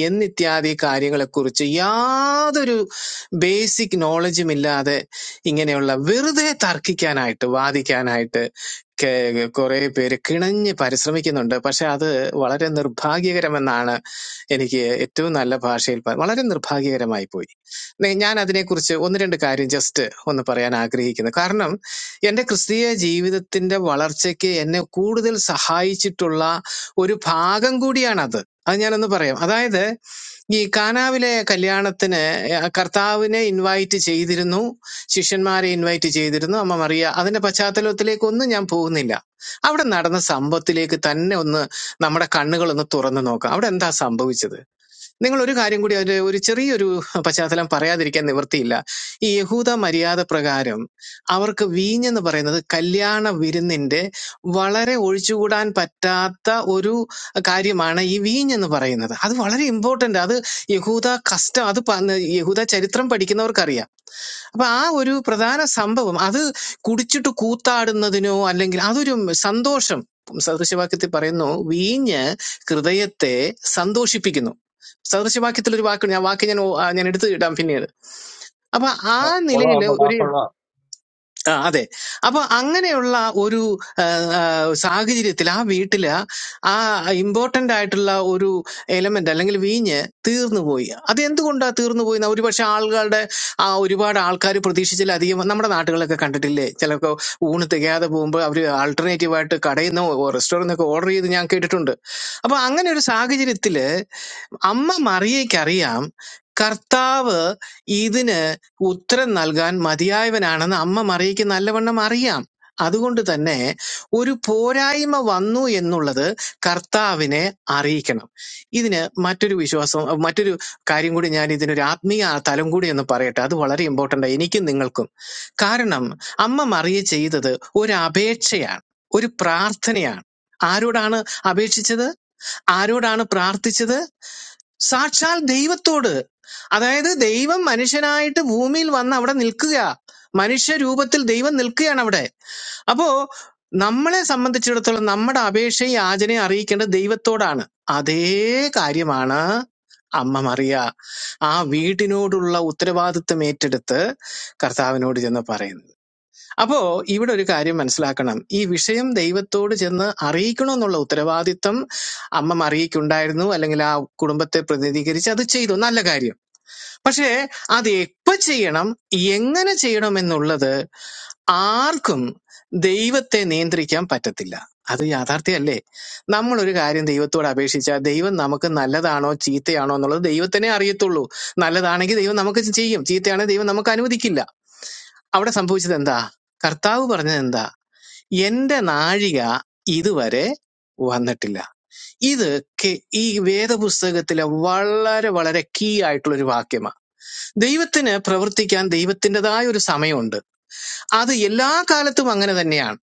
Speaker 6: എന്നിത്യാദി കാര്യങ്ങളെക്കുറിച്ച് യാതൊരു ബേസിക് നോളജും ഇല്ലാതെ ഇങ്ങനെയുള്ള വെറുതെ തർക്കിക്കാനായിട്ട് വാദിക്കാനായിട്ട് കെ- കുറെ പേര് കിണഞ്ഞ് പരിശ്രമിക്കുന്നുണ്ട് പക്ഷെ അത് വളരെ നിർഭാഗ്യകരമെന്നാണ് എനിക്ക് ഏറ്റവും നല്ല ഭാഷയിൽ പ- വളരെ നിർഭാഗ്യകരമായി പോയി നേ- ഞാൻ അതിനെക്കുറിച്ച് ഒന്ന് രണ്ട് കാര്യം ജസ്റ്റ് ഒന്ന് പറയാൻ ആഗ്രഹിക്കുന്നു കാരണം എൻ്റെ ക്രിസ്തീയ ജീവിതത്തിൻ്റെ വളർച്ചയ്ക്ക് എന്നെ കൂടുതൽ സഹായിച്ചിട്ടുള്ള ഒരു ഭാഗം കൂടിയാണത് അത് ഞാനൊന്ന് പറയാം അതായത് ഈ കാനാവിലെ കല്യാണത്തിന് ഏർ കർത്താവിനെ ഇൻവൈറ്റ് ചെയ്തിരുന്നു ശിഷ്യന്മാരെ ഇൻവൈറ്റ് ചെയ്തിരുന്നു അമ്മ മറിയ അതിന്റെ പശ്ചാത്തലത്തിലേക്കൊന്നും ഞാൻ പോകുന്നില്ല അവിടെ നടന്ന സംഭവത്തിലേക്ക് തന്നെ ഒന്ന് നമ്മുടെ കണ്ണുകളൊന്ന് തുറന്നു നോക്കാം അവിടെ എന്താ സംഭവിച്ചത് നിങ്ങൾ ഒരു കാര്യം കൂടി ഒരു ഒരു ചെറിയൊരു പശ്ചാത്തലം പറയാതിരിക്കാൻ നിവൃത്തിയില്ല ഈ യഹൂദ മര്യാദ പ്രകാരം അവർക്ക് വീഞ്ഞെന്ന് പറയുന്നത് കല്യാണ വിരുന്നിന്റെ വളരെ ഒഴിച്ചുകൂടാൻ പറ്റാത്ത ഒരു കാര്യമാണ് ഈ വീഞ്ഞെന്ന് പറയുന്നത് അത് വളരെ ഇമ്പോർട്ടന്റ് അത് യഹൂദ കസ്റ്റം അത് പ- യഹൂദ ചരിത്രം പഠിക്കുന്നവർക്കറിയാം അപ്പൊ ആ ഒരു പ്രധാന സംഭവം അത് കുടിച്ചിട്ട് കൂത്താടുന്നതിനോ അല്ലെങ്കിൽ അതൊരു സന്തോഷം സദൃശവാക്യത്തിൽ പറയുന്നു വീഞ്ഞ് ഹൃദയത്തെ സന്തോഷിപ്പിക്കുന്നു സദൃശവാക്യത്തിൽ ഒരു വാക്കുണ്ട് ഞാൻ വാക്ക് ഞാൻ ഓ- ആ ഞാൻ എടുത്തു ഇടാം പിന്നീട് അപ്പൊ ആ
Speaker 5: ആ,
Speaker 6: നിലയിൽ
Speaker 5: കൊള്ളാം
Speaker 6: ഒരു
Speaker 5: വാക്കുള്ള
Speaker 6: ആ, അതെ അപ്പൊ അങ്ങനെയുള്ള ഒരു ആ, ആ, സാഹചര്യത്തിൽ ആ വീട്ടില് ആ ഇമ്പോർട്ടന്റ് ആയിട്ടുള്ള ഒരു എലമെന്റ് അല്ലെങ്കിൽ വീഞ്ഞ് തീർന്നുപോയി അത് എന്തുകൊണ്ടാ തീർന്നുപോയി എന്ന് ഒരുപക്ഷെ ആളുകളുടെ ആ ഒരുപാട് ആൾക്കാർ പ്രതീക്ഷിച്ചിലധികം നമ്മുടെ നാട്ടുകളൊക്കെ കണ്ടിട്ടില്ലേ ചിലപ്പോൾ ഊണ് തികയാതെ പോകുമ്പോൾ അവർ ആൾട്ടർനേറ്റീവ് ആയിട്ട് കടയിൽ നിന്നോ റെസ്റ്റോറൻറ്റ് ഒക്കെ ഓർഡർ ചെയ്ത് ഞാൻ കേട്ടിട്ടുണ്ട് അപ്പൊ അങ്ങനെ ഒരു സാഹചര്യത്തിൽ അമ്മ മറിയയ്ക്കറിയാം കർത്താവ് ഇതിന് ഉത്തരം നൽകാൻ മതിയായവനാണെന്ന് അമ്മ മറിയയ്ക്ക് നല്ലവണ്ണം അറിയാം അതുകൊണ്ട് തന്നെ ഒരു പോരായ്മ വന്നു എന്നുള്ളത് കർത്താവിനെ അറിയിക്കണം ഇതിന് മറ്റൊരു വിശ്വാസം മറ്റൊരു കാര്യം കൂടി ഞാൻ ഇതിനൊരു ആത്മീയ തലം കൂടി എന്ന് പറയട്ടെ അത് വളരെ ഇമ്പോർട്ടൻ്റ് എനിക്കും നിങ്ങൾക്കും കാരണം അമ്മ മറിയ ചെയ്തത് ഒരു അപേക്ഷയാണ് ഒരു പ്രാർത്ഥനയാണ് ആരോടാണ് അപേക്ഷിച്ചത് ആരോടാണ് പ്രാർത്ഥിച്ചത് സാക്ഷാൽ ദൈവത്തോട് അതായത് ദൈവം മനുഷ്യനായിട്ട് ഭൂമിയിൽ വന്ന് അവിടെ നിൽക്കുക മനുഷ്യ രൂപത്തിൽ ദൈവം നിൽക്കുകയാണ് അവിടെ അപ്പോ നമ്മളെ സംബന്ധിച്ചിടത്തോളം നമ്മുടെ അപേക്ഷയും യാചനയും അറിയിക്കേണ്ടത് ദൈവത്തോടാണ് അതേ കാര്യമാണ് അമ്മ മറിയ ആ വീടിനോടുള്ള ഉത്തരവാദിത്വം ഏറ്റെടുത്ത് കർത്താവിനോട് ചെന്ന് പറയുന്നത് അപ്പോ ഇവിടെ ഒരു കാര്യം മനസ്സിലാക്കണം ഈ വിഷയം ദൈവത്തോട് ചെന്ന് അറിയിക്കണമെന്നുള്ള ഉത്തരവാദിത്തം അമ്മ മറിയക്കുണ്ടായിരുന്നു അല്ലെങ്കിൽ ആ കുടുംബത്തെ പ്രതിനിധീകരിച്ച് അത് ചെയ്തു നല്ല കാര്യം പക്ഷേ അത് എപ്പോ ചെയ്യണം എങ്ങനെ ചെയ്യണം എന്നുള്ളത് ആർക്കും ദൈവത്തെ നിയന്ത്രിക്കാൻ പറ്റത്തില്ല അത് യാഥാർത്ഥ്യമല്ലേ നമ്മൾ ഒരു കാര്യം ദൈവത്തോട് അപേക്ഷിച്ചാൽ ദൈവം നമുക്ക് നല്ലതാണോ ചീത്തയാണോ എന്നുള്ളത് ദൈവത്തിനെ അറിയത്തുള്ളൂ നല്ലതാണെങ്കിൽ ദൈവം നമുക്ക് ചെയ്യും ചീത്തയാണെങ്കിൽ ദൈവം നമുക്ക് അനുവദിക്കില്ല അവിടെ സംഭവിച്ചത് എന്താ കർത്താവ് പറഞ്ഞത് എന്താ എന്റെ നാഴിക ഇതുവരെ വന്നിട്ടില്ല ഇത് കെ- ഈ വേദപുസ്തകത്തിലെ വളരെ വളരെ കീ ആയിട്ടുള്ള ഒരു വാക്യമാണ് ദൈവത്തിന് പ്രവർത്തിക്കാൻ ദൈവത്തിൻ്റെതായ ഒരു സമയമുണ്ട് അത് എല്ലാ കാലത്തും അങ്ങനെ തന്നെയാണ്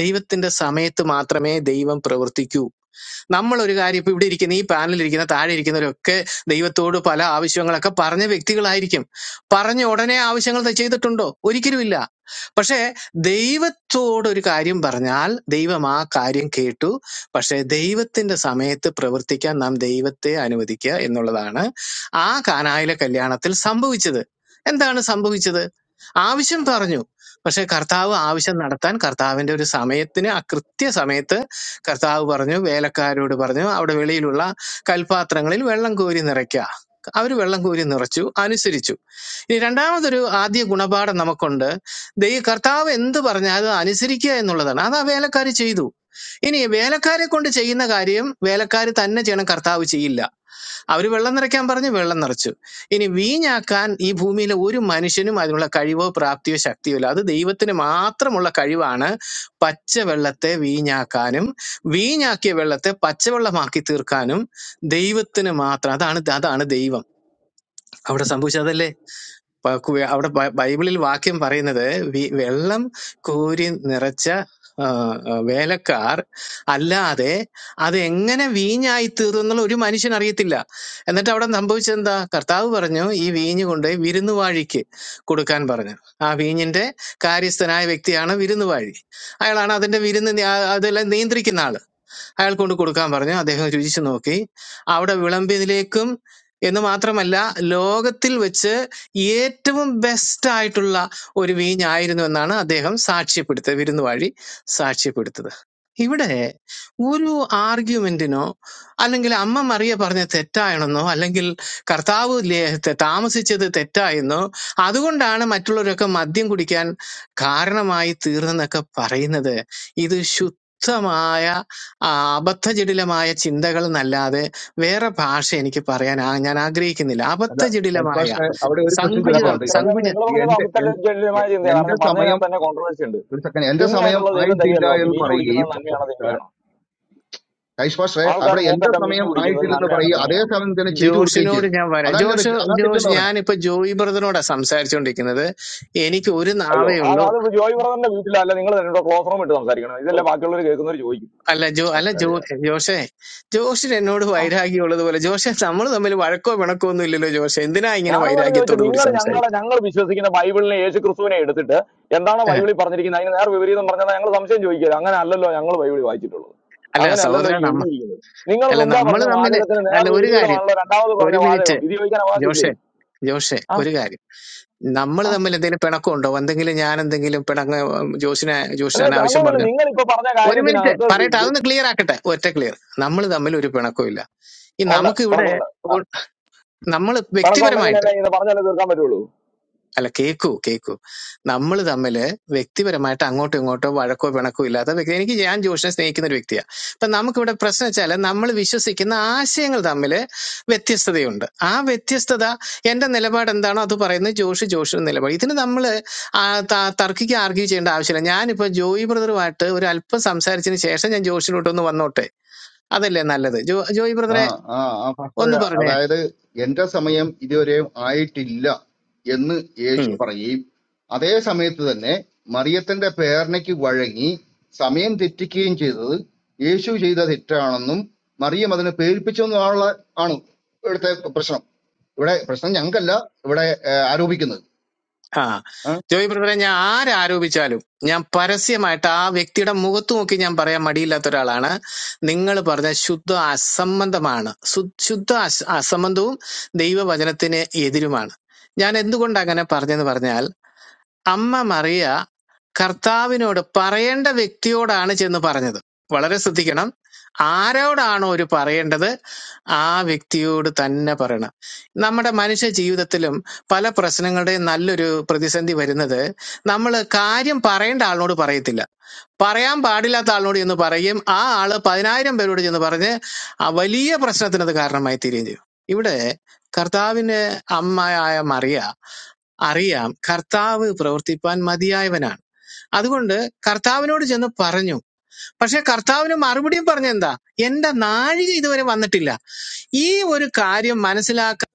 Speaker 6: ദൈവത്തിന്റെ സമയത്ത് മാത്രമേ ദൈവം പ്രവർത്തിക്കൂ നമ്മൾ ഒരു കാര്യം ഇപ്പൊ ഇവിടെ ഇരിക്കുന്ന ഈ പാനലിൽ ഇരിക്കുന്ന താഴെ ഇരിക്കുന്നവരൊക്കെ ദൈവത്തോട് പല ആവശ്യങ്ങളൊക്കെ പറഞ്ഞ വ്യക്തികളായിരിക്കും പറഞ്ഞ ഉടനെ ആവശ്യങ്ങൾ ത- ചെയ്തിട്ടുണ്ടോ ഒരിക്കലുമില്ല പക്ഷേ ദൈവത്തോട് ഒരു കാര്യം പറഞ്ഞാൽ ദൈവം ആ കാര്യം കേട്ടു പക്ഷേ ദൈവത്തിന്റെ സമയത്ത് പ്രവർത്തിക്കാൻ നാം ദൈവത്തെ അനുവദിക്കുക എന്നുള്ളതാണ് ആ കാനായിലെ കല്യാണത്തിൽ സംഭവിച്ചത് എന്താണ് സംഭവിച്ചത് ആവശ്യം പറഞ്ഞു പക്ഷെ കർത്താവ് ആവശ്യം നടത്താൻ കർത്താവിന്റെ ഒരു സമയത്തിന് ആ കൃത്യ സമയത്ത് കർത്താവ് പറഞ്ഞു വേലക്കാരോട് പറഞ്ഞു അവിടെ വെളിയിലുള്ള കൽപാത്രങ്ങളിൽ വെള്ളം കോരി നിറയ്ക്കുക അവർ വെള്ളം കോരി നിറച്ചു അനുസരിച്ചു ഇനി രണ്ടാമതൊരു ആദ്യ ഗുണപാഠം നമുക്കുണ്ട് ദൈവ കർത്താവ് എന്ത് പറഞ്ഞാൽ അത് അനുസരിക്കുക എന്നുള്ളതാണ് അത് ആ വേലക്കാർ ചെയ്തു ഇനി വേലക്കാരെ കൊണ്ട് ചെയ്യുന്ന കാര്യം വേലക്കാർ തന്നെ ചെയ്യണം കർത്താവ് ചെയ്യില്ല അവർ വെള്ളം നിറയ്ക്കാൻ പറഞ്ഞ് വെള്ളം നിറച്ചു ഇനി വീഞ്ഞാക്കാൻ ഈ ഭൂമിയിലെ ഒരു മനുഷ്യനും അതിനുള്ള കഴിവോ പ്രാപ്തിയോ ശക്തിയോ ഇല്ല അത് ദൈവത്തിന് മാത്രമുള്ള കഴിവാണ് പച്ച വെള്ളത്തെ വീഞ്ഞാക്കാനും വീഞ്ഞാക്കിയ വെള്ളത്തെ പച്ചവെള്ളമാക്കി തീർക്കാനും ദൈവത്തിന് മാത്രം അതാണ് അതാണ് ദൈവം അവിടെ സംഭവിച്ചതല്ലേ പ- കു- അവിടെ ബ- ബൈബിളിൽ വാക്യം പറയുന്നത് വി- വെള്ളം കോരി നിറച്ച ആ, ആ, വേലക്കാർ അല്ലാതെ അത് എങ്ങനെ വീഞ്ഞായി തീർന്നു എന്നുള്ള ഒരു മനുഷ്യൻ അറിയത്തില്ല എന്നിട്ട് അവിടെ സംഭവിച്ചെന്താ കർത്താവ് പറഞ്ഞു ഈ വീഞ്ഞ് കൊണ്ടുപോയി വിരുന്നുവാഴിക്ക് കൊടുക്കാൻ പറഞ്ഞു ആ വീഞ്ഞിന്റെ കാര്യസ്ഥനായ വ്യക്തിയാണ് വിരുന്നുവാഴി അയാളാണ് അതിന്റെ വിരുന്ന് നി- ആ- അതെല്ലാം നിയന്ത്രിക്കുന്ന ആള് അയാൾ കൊണ്ട് കൊടുക്കാൻ പറഞ്ഞു അദ്ദേഹം രുചിച്ചു നോക്കി അവിടെ വിളമ്പിയതിലേക്കും എന്ന് മാത്രമല്ല ലോകത്തിൽ വെച്ച് ഏറ്റവും ബെസ്റ്റ് ആയിട്ടുള്ള ഒരു വീഞ്ഞായിരുന്നു എന്നാണ് അദ്ദേഹം സാക്ഷ്യപ്പെടുത്തുന്നത് വിരുന്നുവാഴി സാക്ഷ്യപ്പെടുത്തത് ഇവിടെ ഒരു ആർഗ്യുമെന്റിനോ അല്ലെങ്കിൽ അമ്മ മറിയ പറഞ്ഞ തെറ്റാണെന്നോ അല്ലെങ്കിൽ കർത്താവ് ലേ- ത- താമസിച്ചത് തെറ്റായെന്നോ അതുകൊണ്ടാണ് മറ്റുള്ളവരൊക്കെ മദ്യം കുടിക്കാൻ കാരണമായി തീർന്നെന്നൊക്കെ പറയുന്നത് ഇത് ശുദ്ധമായ ആ അബദ്ധജടിലമായ ചിന്തകൾ എന്നല്ലാതെ വേറെ ഭാഷ എനിക്ക് പറയാൻ ആ- ഞാൻ ആഗ്രഹിക്കുന്നില്ല
Speaker 5: അല്ല
Speaker 6: അബദ്ധജടിലമായ
Speaker 5: പാസ്റ്ററെ അവിടെ ഒരു ക്വസ്റ്റ്യൻ
Speaker 4: അല്ല അപ്പൊ
Speaker 6: സങ്കുചിതം
Speaker 5: ചോദിക്കുന്നുണ്ട്
Speaker 4: ഇത്ര
Speaker 5: എൻ-
Speaker 4: നേരം
Speaker 6: സങ്കുച
Speaker 4: നിങ്ങൾ പറഞ്ഞത്
Speaker 5: എന്റെ എൻ-
Speaker 4: അമിത്തലജ്ജമായ
Speaker 5: എ-
Speaker 4: ചിന്തയാണ്
Speaker 5: എന്റെ
Speaker 4: കാരണം
Speaker 5: സമയം
Speaker 4: പറഞ്ഞതിനകത്ത് തന്നെ കോൺട്രവേഴ്സി ഉണ്ട്
Speaker 5: ഒരു സെക്കൻഡ് എന്റെ സമയം
Speaker 4: തിന്മയായിട്ടുള്ള ദൈവം
Speaker 5: ആയിട്ടില്ല
Speaker 4: തരികയല്ല പറഞ്ഞു
Speaker 5: എന്ന്
Speaker 4: വീഞ്ഞു കുടിക്കുന്നത്
Speaker 5: പറയുകയും
Speaker 4: നന്മയാണോ തിന്മയാണോ
Speaker 5: കൈഷ് പാസ്റ്ററെ
Speaker 4: ആൾക്കാർ
Speaker 5: അവിടെ എന്റെ
Speaker 4: മൂക്കറ്റം വീഞ്ഞു
Speaker 5: സമയം
Speaker 4: കുടിക്കുന്നത്
Speaker 5: ആയിട്ടില്ലെന്ന്
Speaker 4: നന്മയാണോ
Speaker 5: പറയുകയും അതേ
Speaker 4: തിന്മയാണോ
Speaker 5: സമയം തന്നെ ചെയ്തു കൊടുക്കുകയും
Speaker 6: ജോഷിനോട്
Speaker 5: ചെയ്തു
Speaker 6: ഞാൻ വരാം
Speaker 5: അതല്ല
Speaker 6: ജോഷ്
Speaker 5: തെറ്റ് അതാ
Speaker 6: ജോഷ്
Speaker 5: തെറ്റെന്ന്
Speaker 6: ഞാനിപ്പോ ജോയി ബ്രദറിനോടാ സംസാരിച്ചുകൊണ്ടിരിക്കുന്നത് എനിക്ക് ഒരു
Speaker 4: അയ്യോ
Speaker 6: നാവേ
Speaker 4: ആ
Speaker 6: ഉള്ളൂ
Speaker 4: അത് ജോയ് ബ്രദറിന്റെ വീട്ടിലല്ല നിങ്ങൾ തന്നെ ക്ലോസ് റൂം ഇട്ട് സംസാരിക്കണം
Speaker 6: ഓ,
Speaker 4: ഇതല്ലേ ബാക്കിയുള്ളവർ കേൾക്കുന്നവർ ചോദിക്കും
Speaker 6: അല്ല ജോ അല്ല ജോ
Speaker 5: പറയണം
Speaker 6: ജോഷേ ജോഷിന് എന്നോട്
Speaker 4: ആ
Speaker 6: വൈരാഗ്യമുള്ളത് പോലെ ജോഷേ നമ്മൾ തമ്മിൽ വഴക്കോ പിണക്കോ ഒന്നും ഇല്ലല്ലോ ജോഷേ എന്തിനാ ഇങ്ങനെ
Speaker 4: ഞാനതല്ല ചോദിച്ചത്
Speaker 6: വൈരാഗ്യത്തോട് കൂടി
Speaker 4: നിങ്ങൾ ഞങ്ങളെ
Speaker 6: സംസാരിക്കും
Speaker 4: ഞങ്ങൾ വിശ്വസിക്കുന്ന ബൈബിളിനെ യേശു ക്രിസ്തുവിനെ എടുത്തിട്ട് എന്താണോ ബൈബിളിൽ പറഞ്ഞിരിക്കുന്നത് അതിന് നേർ വിപരീതം പറഞ്ഞാൽ ഞങ്ങൾ സംശയം ചോദിക്കുക അങ്ങനെ അല്ലല്ലോ ഞങ്ങൾ ബൈബിളിൽ വായിച്ചിട്ടുള്ളത്
Speaker 6: അല്ല
Speaker 4: അങ്ങനെ അല്ലല്ലോ
Speaker 6: സഹോദര
Speaker 4: ഈ
Speaker 6: നമ്മ
Speaker 4: എഴുതിയിരിക്കുന്നത് നിങ്ങൾ
Speaker 6: അല്ല
Speaker 4: മുമ്പേ
Speaker 6: നമ്മൾ
Speaker 4: പറഞ്ഞ
Speaker 6: തമ്മിൽ
Speaker 4: വാചകത്തിന് നേർ
Speaker 6: അല്ല ഒരു കാര്യം
Speaker 4: വിപരീതമാണല്ലോ രണ്ടാമത് പറഞ്ഞ
Speaker 6: ഒരു മിനിറ്റ്
Speaker 4: വാചകം ഇത് ചോദിക്കാൻ അവകാശമില്ലേ
Speaker 6: ജോഷെ ജോഷെ
Speaker 4: ആ
Speaker 6: ഒരു കാര്യം നമ്മൾ
Speaker 4: ആ
Speaker 6: തമ്മിൽ എന്തെങ്കിലും പിണക്കമുണ്ടോ എന്തെങ്കിലും ഞാൻ എന്തെങ്കിലും പിണങ്ങ ജോഷിനെ ജോഷിന്
Speaker 4: അല്ലാതെ
Speaker 6: അനാവശ്യം
Speaker 4: പിണക്കമൊന്നുമില്ല
Speaker 6: പറഞ്ഞു
Speaker 4: നിങ്ങൾ ഇപ്പൊ പറഞ്ഞ
Speaker 6: ഒരു മിനിറ്റ്
Speaker 4: കാര്യത്തിനകത്ത്
Speaker 6: പറയട്ടെ അതൊന്ന് ക്ലിയർ ആക്കട്ടെ ഒറ്റ ക്ലിയർ നമ്മൾ തമ്മിൽ ഒരു പിണക്കവും ഇല്ല ഈ
Speaker 4: ഉണ്ട്
Speaker 6: നമുക്ക് ഇവിടെ
Speaker 4: പിണക്കമുണ്ട്
Speaker 6: നമ്മൾ
Speaker 4: കണക്കുണ്ടെങ്കിൽ
Speaker 6: വ്യക്തിപരമായിട്ട്
Speaker 4: അല്ലേ ഇങ്ങനെ പറഞ്ഞാലേ തീർക്കാൻ പറ്റുള്ളൂ
Speaker 6: അല്ല കേക്കൂ കേക്കൂ നമ്മൾ തമ്മിൽ വ്യക്തിപരമായിട്ട് അങ്ങോട്ടോ ഇങ്ങോട്ടോ വഴക്കോ പിണക്കോ ഇല്ലാത്ത വ്യക്തി എനിക്ക് ഞാൻ ജോഷിനെ സ്നേഹിക്കുന്ന ഒരു വ്യക്തിയാണ് അപ്പൊ നമുക്കിവിടെ പ്രശ്നം വെച്ചാൽ നമ്മൾ വിശ്വസിക്കുന്ന ആശയങ്ങൾ തമ്മിൽ വ്യത്യസ്തതയുണ്ട് ആ വ്യത്യസ്തത എന്റെ നിലപാട് എന്താണോ അത് പറയുന്നത് ജോഷി ജോഷിയുടെ നിലപാട് ഇതിന് നമ്മൾ തർക്കിക്ക് ആർഗ്യൂ ചെയ്യേണ്ട ആവശ്യമില്ല ഞാനിപ്പോ ജോയി ബ്രദറുമായിട്ട് ഒരു അല്പം സംസാരിച്ചതിന് ശേഷം ഞാൻ ജോഷിലോട്ടൊന്ന് വന്നോട്ടെ അതല്ലേ നല്ലത് ജോ ജോയി
Speaker 5: ആ
Speaker 6: ബ്രദറെ
Speaker 5: ആ ആ ഫസ്റ്റ്
Speaker 6: ഒന്ന് പറഞ്ഞേ
Speaker 5: അതായത് എന്റെ സമയം ഇതുവരെയും ആയിട്ടില്ല എന്ന് യേശു പറയുകയും അതേ സമയത്ത് തന്നെ മറിയത്തിന്റെ പേരണയ്ക്ക് വഴങ്ങി സമയം തെറ്റിക്കുകയും ചെയ്തത് യേശു ചെയ്ത തെറ്റാണെന്നും മറിയം അതിനെ പേരിപ്പിച്ചെന്നുള്ള ആണ് ഇവിടുത്തെ പ്രശ്നം ഇവിടെ പ്രശ്നം ഞങ്ങൾക്കല്ല ഇവിടെ ഏ, ആരോപിക്കുന്നത്
Speaker 6: ആ
Speaker 5: ആ
Speaker 6: ജോയി ബ്രദറെ ഞാൻ ആരാരോപിച്ചാലും ഞാൻ പരസ്യമായിട്ട് ആ വ്യക്തിയുടെ മുഖത്ത് നോക്കി ഞാൻ പറയാൻ മടിയില്ലാത്ത ഒരാളാണ് നിങ്ങൾ പറഞ്ഞ ശുദ്ധ അസംബന്ധമാണ് സു- ശുദ്ധ അസ- അസംബന്ധവും ദൈവവചനത്തിന് എതിരുമാണ് ഞാൻ എന്തുകൊണ്ട് അങ്ങനെ പറഞ്ഞെന്ന് പറഞ്ഞാൽ അമ്മ മറിയ കർത്താവിനോട് പറയേണ്ട വ്യക്തിയോടാണ് ചെന്ന് പറഞ്ഞത് വളരെ ശ്രദ്ധിക്കണം ആരോടാണോ ഒരു പറയേണ്ടത് ആ വ്യക്തിയോട് തന്നെ പറയണം നമ്മുടെ മനുഷ്യ ജീവിതത്തിലും പല പ്രശ്നങ്ങളുടെയും നല്ലൊരു പ്രതിസന്ധി വരുന്നത് നമ്മൾ കാര്യം പറയേണ്ട ആളിനോട് പറയത്തില്ല പറയാൻ പാടില്ലാത്ത ആളിനോട് ചെന്ന് പറയും ആ ആള് പതിനായിരം പേരോട് ചെന്ന് പറഞ്ഞ് ആ വലിയ പ്രശ്നത്തിനത് കാരണമായി തീരുകയും ചെയ്യും ഇവിടെ കർത്താവിന് അമ്മയായ മറിയ അറിയാം കർത്താവ് പ്രവർത്തിപ്പാൻ മതിയായവനാണ് അതുകൊണ്ട് കർത്താവിനോട് ചെന്ന് പറഞ്ഞു പക്ഷെ കർത്താവിന് മറുപടിയും പറഞ്ഞെന്താ എന്റെ നാഴിക ഇതുവരെ വന്നിട്ടില്ല ഈ ഒരു കാര്യം മനസ്സിലാക്കാൻ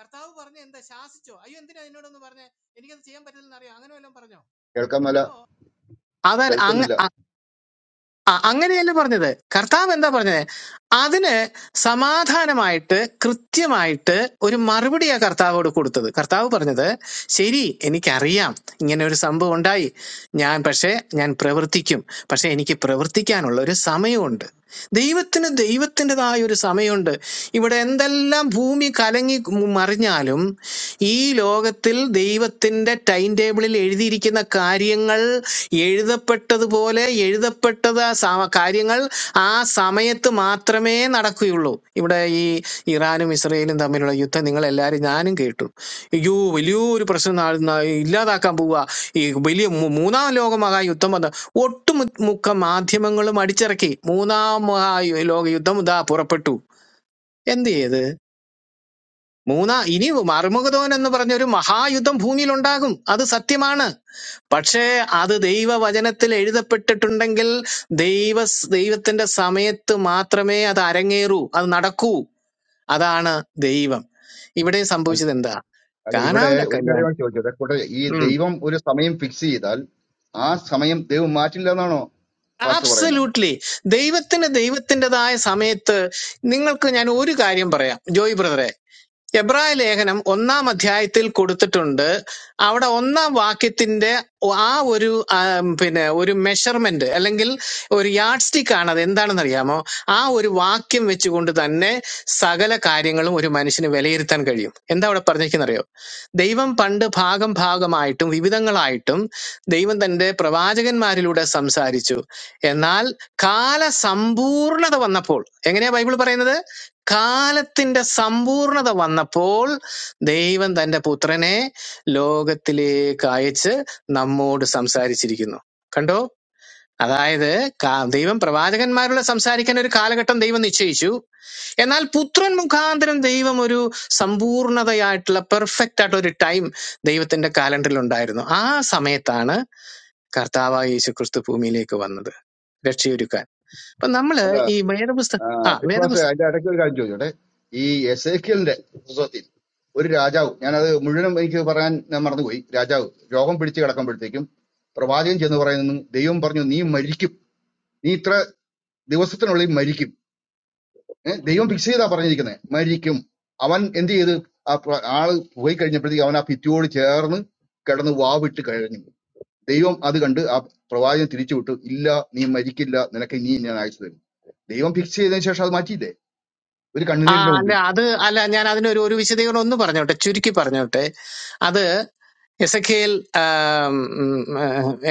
Speaker 6: കർത്താവ് പറഞ്ഞ എന്താ ശാസിച്ചോ അയ്യോ എന്തിനാ എന്നോടൊന്ന് പറഞ്ഞേ എനിക്കത് ചെയ്യാൻ പറ്റില്ലെന്ന് അറിയാം അങ്ങനെ വല്ലതും പറഞ്ഞോ
Speaker 5: കേൾക്കാൻ മേല
Speaker 6: അപ്പോ
Speaker 5: കേൾക്കുന്നില്ല
Speaker 6: അതാ ആ അങ്ങനെയല്ല പറഞ്ഞത് കർത്താവ് എന്താ പറഞ്ഞത് അതിന് സമാധാനമായിട്ട് കൃത്യമായിട്ട് ഒരു മറുപടിയാ കർത്താവോട് കൊടുത്തത് കർത്താവ് പറഞ്ഞത് ശരി എനിക്കറിയാം ഇങ്ങനെ ഒരു സംഭവം ഉണ്ടായി ഞാൻ പക്ഷേ ഞാൻ പ്രവർത്തിക്കും പക്ഷെ എനിക്ക് പ്രവർത്തിക്കാനുള്ള ഒരു സമയമുണ്ട് ദൈവത്തിന് ദൈവത്തിൻ്റെതായ ഒരു സമയമുണ്ട് ഇവിടെ എന്തെല്ലാം ഭൂമി കലങ്ങി മറിഞ്ഞാലും ഈ ലോകത്തിൽ ദൈവത്തിൻ്റെ ടൈം ടേബിളിൽ എഴുതിയിരിക്കുന്ന കാര്യങ്ങൾ എഴുതപ്പെട്ടതുപോലെ എഴുതപ്പെട്ടത് ആ സ- കാര്യങ്ങൾ ആ സമയത്ത് മാത്രമേ നടക്കുകയുള്ളൂ ഇവിടെ ഈ ഇറാനും ഇസ്രയേലും തമ്മിലുള്ള യുദ്ധം നിങ്ങൾ എല്ലാവരും ഞാനും കേട്ടു അയ്യോ വലിയൊരു പ്രശ്നം നാ- നാ- ഇല്ലാതാക്കാൻ പോവുക ഈ വലിയ മൂ- മൂന്നാം ലോകമഹാ യുദ്ധം വന്ന് ഒട്ടുമുക്ക മാധ്യമങ്ങളും അടിച്ചിറക്കി മൂന്നാം മഹായുദ്ധം ഇതാ പുറപ്പെട്ടു എന്ത് ചെയ്ത് മൂന്നാ ഇനി മറുമുഖതോൻ എന്ന് പറഞ്ഞ ഒരു മഹായുദ്ധം ഭൂമിയിൽ ഉണ്ടാകും അത് സത്യമാണ് പക്ഷേ അത് ദൈവവചനത്തിൽ എഴുതപ്പെട്ടിട്ടുണ്ടെങ്കിൽ ദൈവ ദൈവത്തിന്റെ സമയത്ത് മാത്രമേ അത് അരങ്ങേറൂ അത് നടക്കൂ അതാണ് ദൈവം ഇവിടെ
Speaker 5: അൽ-
Speaker 6: സംഭവിച്ചത് എന്താ
Speaker 5: അല്ല ഇവിടെ
Speaker 6: കാനാവിലെ
Speaker 5: ഒരു
Speaker 6: കല്യാണം
Speaker 5: കാര്യമാണ് ചോദിച്ചത് കൂടെ ഈ ദൈവം ഒരു സമയം ഫിക്സ് ചെയ്താൽ ആ സമയം ദൈവം മാറ്റില്ല പാസ്റ്റർ പറയുന്നത്
Speaker 6: ആബ്സല്യൂട്ട്ലി ദൈവത്തിന് ദൈവത്തിൻ്റെതായ സമയത്ത് നിങ്ങൾക്ക് ഞാൻ ഒരു കാര്യം പറയാം ജോയ് ബ്രദറെ എബ്രായ ലേഖനം ഒന്നാം അധ്യായത്തിൽ കൊടുത്തിട്ടുണ്ട് അവിടെ ഒന്നാം വാക്യത്തിന്റെ ആ ഒരു ആം, പിന്നെ ഒരു മെഷർമെന്റ് അല്ലെങ്കിൽ ഒരു യാഡ് സ്റ്റിക്ക് ആണ് അത് എന്താണെന്ന് അറിയാമോ ആ ഒരു വാക്യം വെച്ചുകൊണ്ട് തന്നെ സകല കാര്യങ്ങളും ഒരു മനുഷ്യന് വിലയിരുത്താൻ കഴിയും എന്താ അവിടെ പറഞ്ഞിരിക്കുന്നറിയോ ദൈവം പണ്ട് ഭാഗം ഭാഗമായിട്ടും വിവിധങ്ങളായിട്ടും ദൈവം തന്റെ പ്രവാചകന്മാരിലൂടെ സംസാരിച്ചു എന്നാൽ കാലസമ്പൂർണത വന്നപ്പോൾ എങ്ങനെയാ ബൈബിൾ പറയുന്നത് കാലത്തിന്റെ സമ്പൂർണത വന്നപ്പോൾ ദൈവം തന്റെ പുത്രനെ ലോകത്തിലേക്ക് അയച്ച് നമ്മോട് സംസാരിച്ചിരിക്കുന്നു കണ്ടോ അതായത് കാ- ദൈവം പ്രവാചകന്മാരോട് സംസാരിക്കാൻ ഒരു കാലഘട്ടം ദൈവം നിശ്ചയിച്ചു എന്നാൽ പുത്രൻ മുഖാന്തരം ദൈവം ഒരു സമ്പൂർണതയായിട്ടുള്ള പെർഫെക്റ്റ് ആയിട്ടുള്ള ഒരു ടൈം ദൈവത്തിന്റെ കാലണ്ടറിൽ ഉണ്ടായിരുന്നു ആ സമയത്താണ് കർത്താവായ യേശു ക്രിസ്തു ഭൂമിയിലേക്ക് വന്നത് രക്ഷയൊരുക്കാൻ അപ്പൊ നമ്മള്
Speaker 5: അല്ല
Speaker 6: ഈ വേദപുസ്തകം
Speaker 5: ആ,
Speaker 6: ആ
Speaker 5: വിശ്വാസ
Speaker 6: വേദപുസ്തകം
Speaker 5: അതിന്റെ ഇടയ്ക്ക് ഒരു കാര്യം ചോദിച്ചോട്ടെ ഈ എസേക്കിയലിന്റെ പുസ്തകത്തിൽ ഒരു രാജാവ് ഞാനത് മുഴുവനും എനിക്ക് പറയാൻ ഞാൻ മറന്നുപോയി രാജാവ് രോഗം പിടിച്ച് കിടക്കുമ്പോഴത്തേക്കും പ്രവാചകൻ ചെന്ന് പറയുന്നു ദൈവം പറഞ്ഞു നീ മരിക്കും നീ ഇത്ര ദിവസത്തിനുള്ളിൽ മരിക്കും ഏ, ദൈവം ഫിക്സ് ചെയ്താ പറഞ്ഞിരിക്കുന്നത് മരിക്കും അവൻ എന്ത് ചെയ്ത് ആ പ്ര- ആള് പോയി കഴിഞ്ഞപ്പോഴത്തേക്ക് അവൻ ആ ഭിത്തിയോട് ചേർന്ന് കിടന്ന് വാവിട്ട് കഴിഞ്ഞു ദൈവം അത് കണ്ട് ആ പ്രവാചകൻ തിരിച്ചു വിട്ടു ഇല്ല നീ മരിക്കില്ല നിനക്ക് ഇനി ഞാൻ അയച്ചു തരും ദൈവം ഫിക്സ് ചെയ്തതിന് ശേഷം അത് മാറ്റിയില്ലേ ഒരു
Speaker 6: ആ
Speaker 5: കണ്ണുനീരിന്റെ
Speaker 6: അല്ല
Speaker 5: മുമ്പിൽ
Speaker 6: അത് അല്ല ഞാൻ അതിനൊരു ഒരു വിശദീകരണം ഒന്ന് പറഞ്ഞോട്ടെ ചുരുക്കി പറഞ്ഞോട്ടെ അത് എസക്കേൽ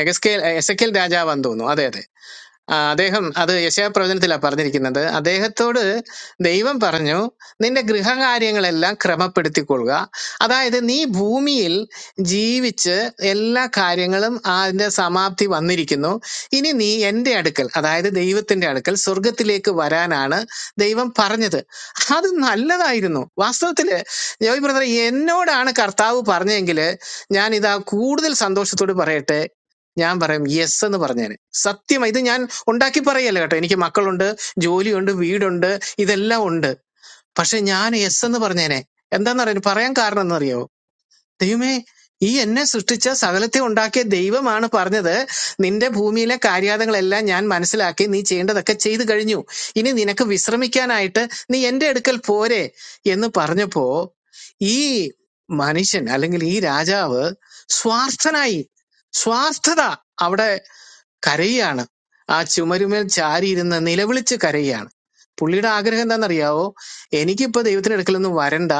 Speaker 6: എസക്കേൽ എസക്കേൽ രാജാവാന്ന് തോന്നുന്നു അതെ അതെ ആ, അദ്ദേഹം അത് യശയാപ്രവചനത്തിലാണ് പറഞ്ഞിരിക്കുന്നത് അദ്ദേഹത്തോട് ദൈവം പറഞ്ഞു നിന്റെ ഗൃഹകാര്യങ്ങളെല്ലാം ക്രമപ്പെടുത്തിക്കൊള്ളുക അതായത് നീ ഭൂമിയിൽ ജീവിച്ച് എല്ലാ കാര്യങ്ങളും അതിൻ്റെ സമാപ്തി വന്നിരിക്കുന്നു ഇനി നീ എൻ്റെ അടുക്കൽ അതായത് ദൈവത്തിൻ്റെ അടുക്കൽ സ്വർഗത്തിലേക്ക് വരാനാണ് ദൈവം പറഞ്ഞത് അത് നല്ലതായിരുന്നു വാസ്തവത്തിൽ ജോയ് ബ്രദർ എന്നോടാണ് കർത്താവ് പറഞ്ഞെങ്കിൽ ഞാൻ ഇതാ കൂടുതൽ സന്തോഷത്തോട് പറയട്ടെ ഞാൻ പറയും യെസ് എന്ന് പറഞ്ഞേനെ സത്യം ഇത് ഞാൻ ഉണ്ടാക്കി പറയല്ല കേട്ടോ എനിക്ക് മക്കളുണ്ട് ജോലിയുണ്ട് വീടുണ്ട് ഇതെല്ലാം ഉണ്ട് പക്ഷെ ഞാൻ എസ് എന്ന് പറഞ്ഞേനെ എന്താണെന്നറിയാൻ പറയാൻ കാരണം എന്നറിയോ ദൈവമേ ഈ എന്നെ സൃഷ്ടിച്ച സകലത്തെ ഉണ്ടാക്കിയ ദൈവമാണ് പറഞ്ഞത് നിന്റെ ഭൂമിയിലെ കാര്യാതങ്ങളെല്ലാം ഞാൻ മനസ്സിലാക്കി നീ ചെയ്യേണ്ടതൊക്കെ ചെയ്തു കഴിഞ്ഞു ഇനി നിനക്ക് വിശ്രമിക്കാനായിട്ട് നീ എന്റെ അടുക്കൽ പോരെ എന്ന് പറഞ്ഞപ്പോ ഈ മനുഷ്യൻ അല്ലെങ്കിൽ ഈ രാജാവ് സ്വാർത്ഥനായി സ്വാർത്ഥത അവിടെ കരയുകയാണ് ആ ചുമരുമേൽ ചാരിയിരുന്ന് നിലവിളിച്ച് കരയുകയാണ് പുള്ളിയുടെ ആഗ്രഹം എന്താണെന്നറിയാവോ എനിക്കിപ്പോൾ ദൈവത്തിന്റെ അടുക്കലൊന്നും വരണ്ട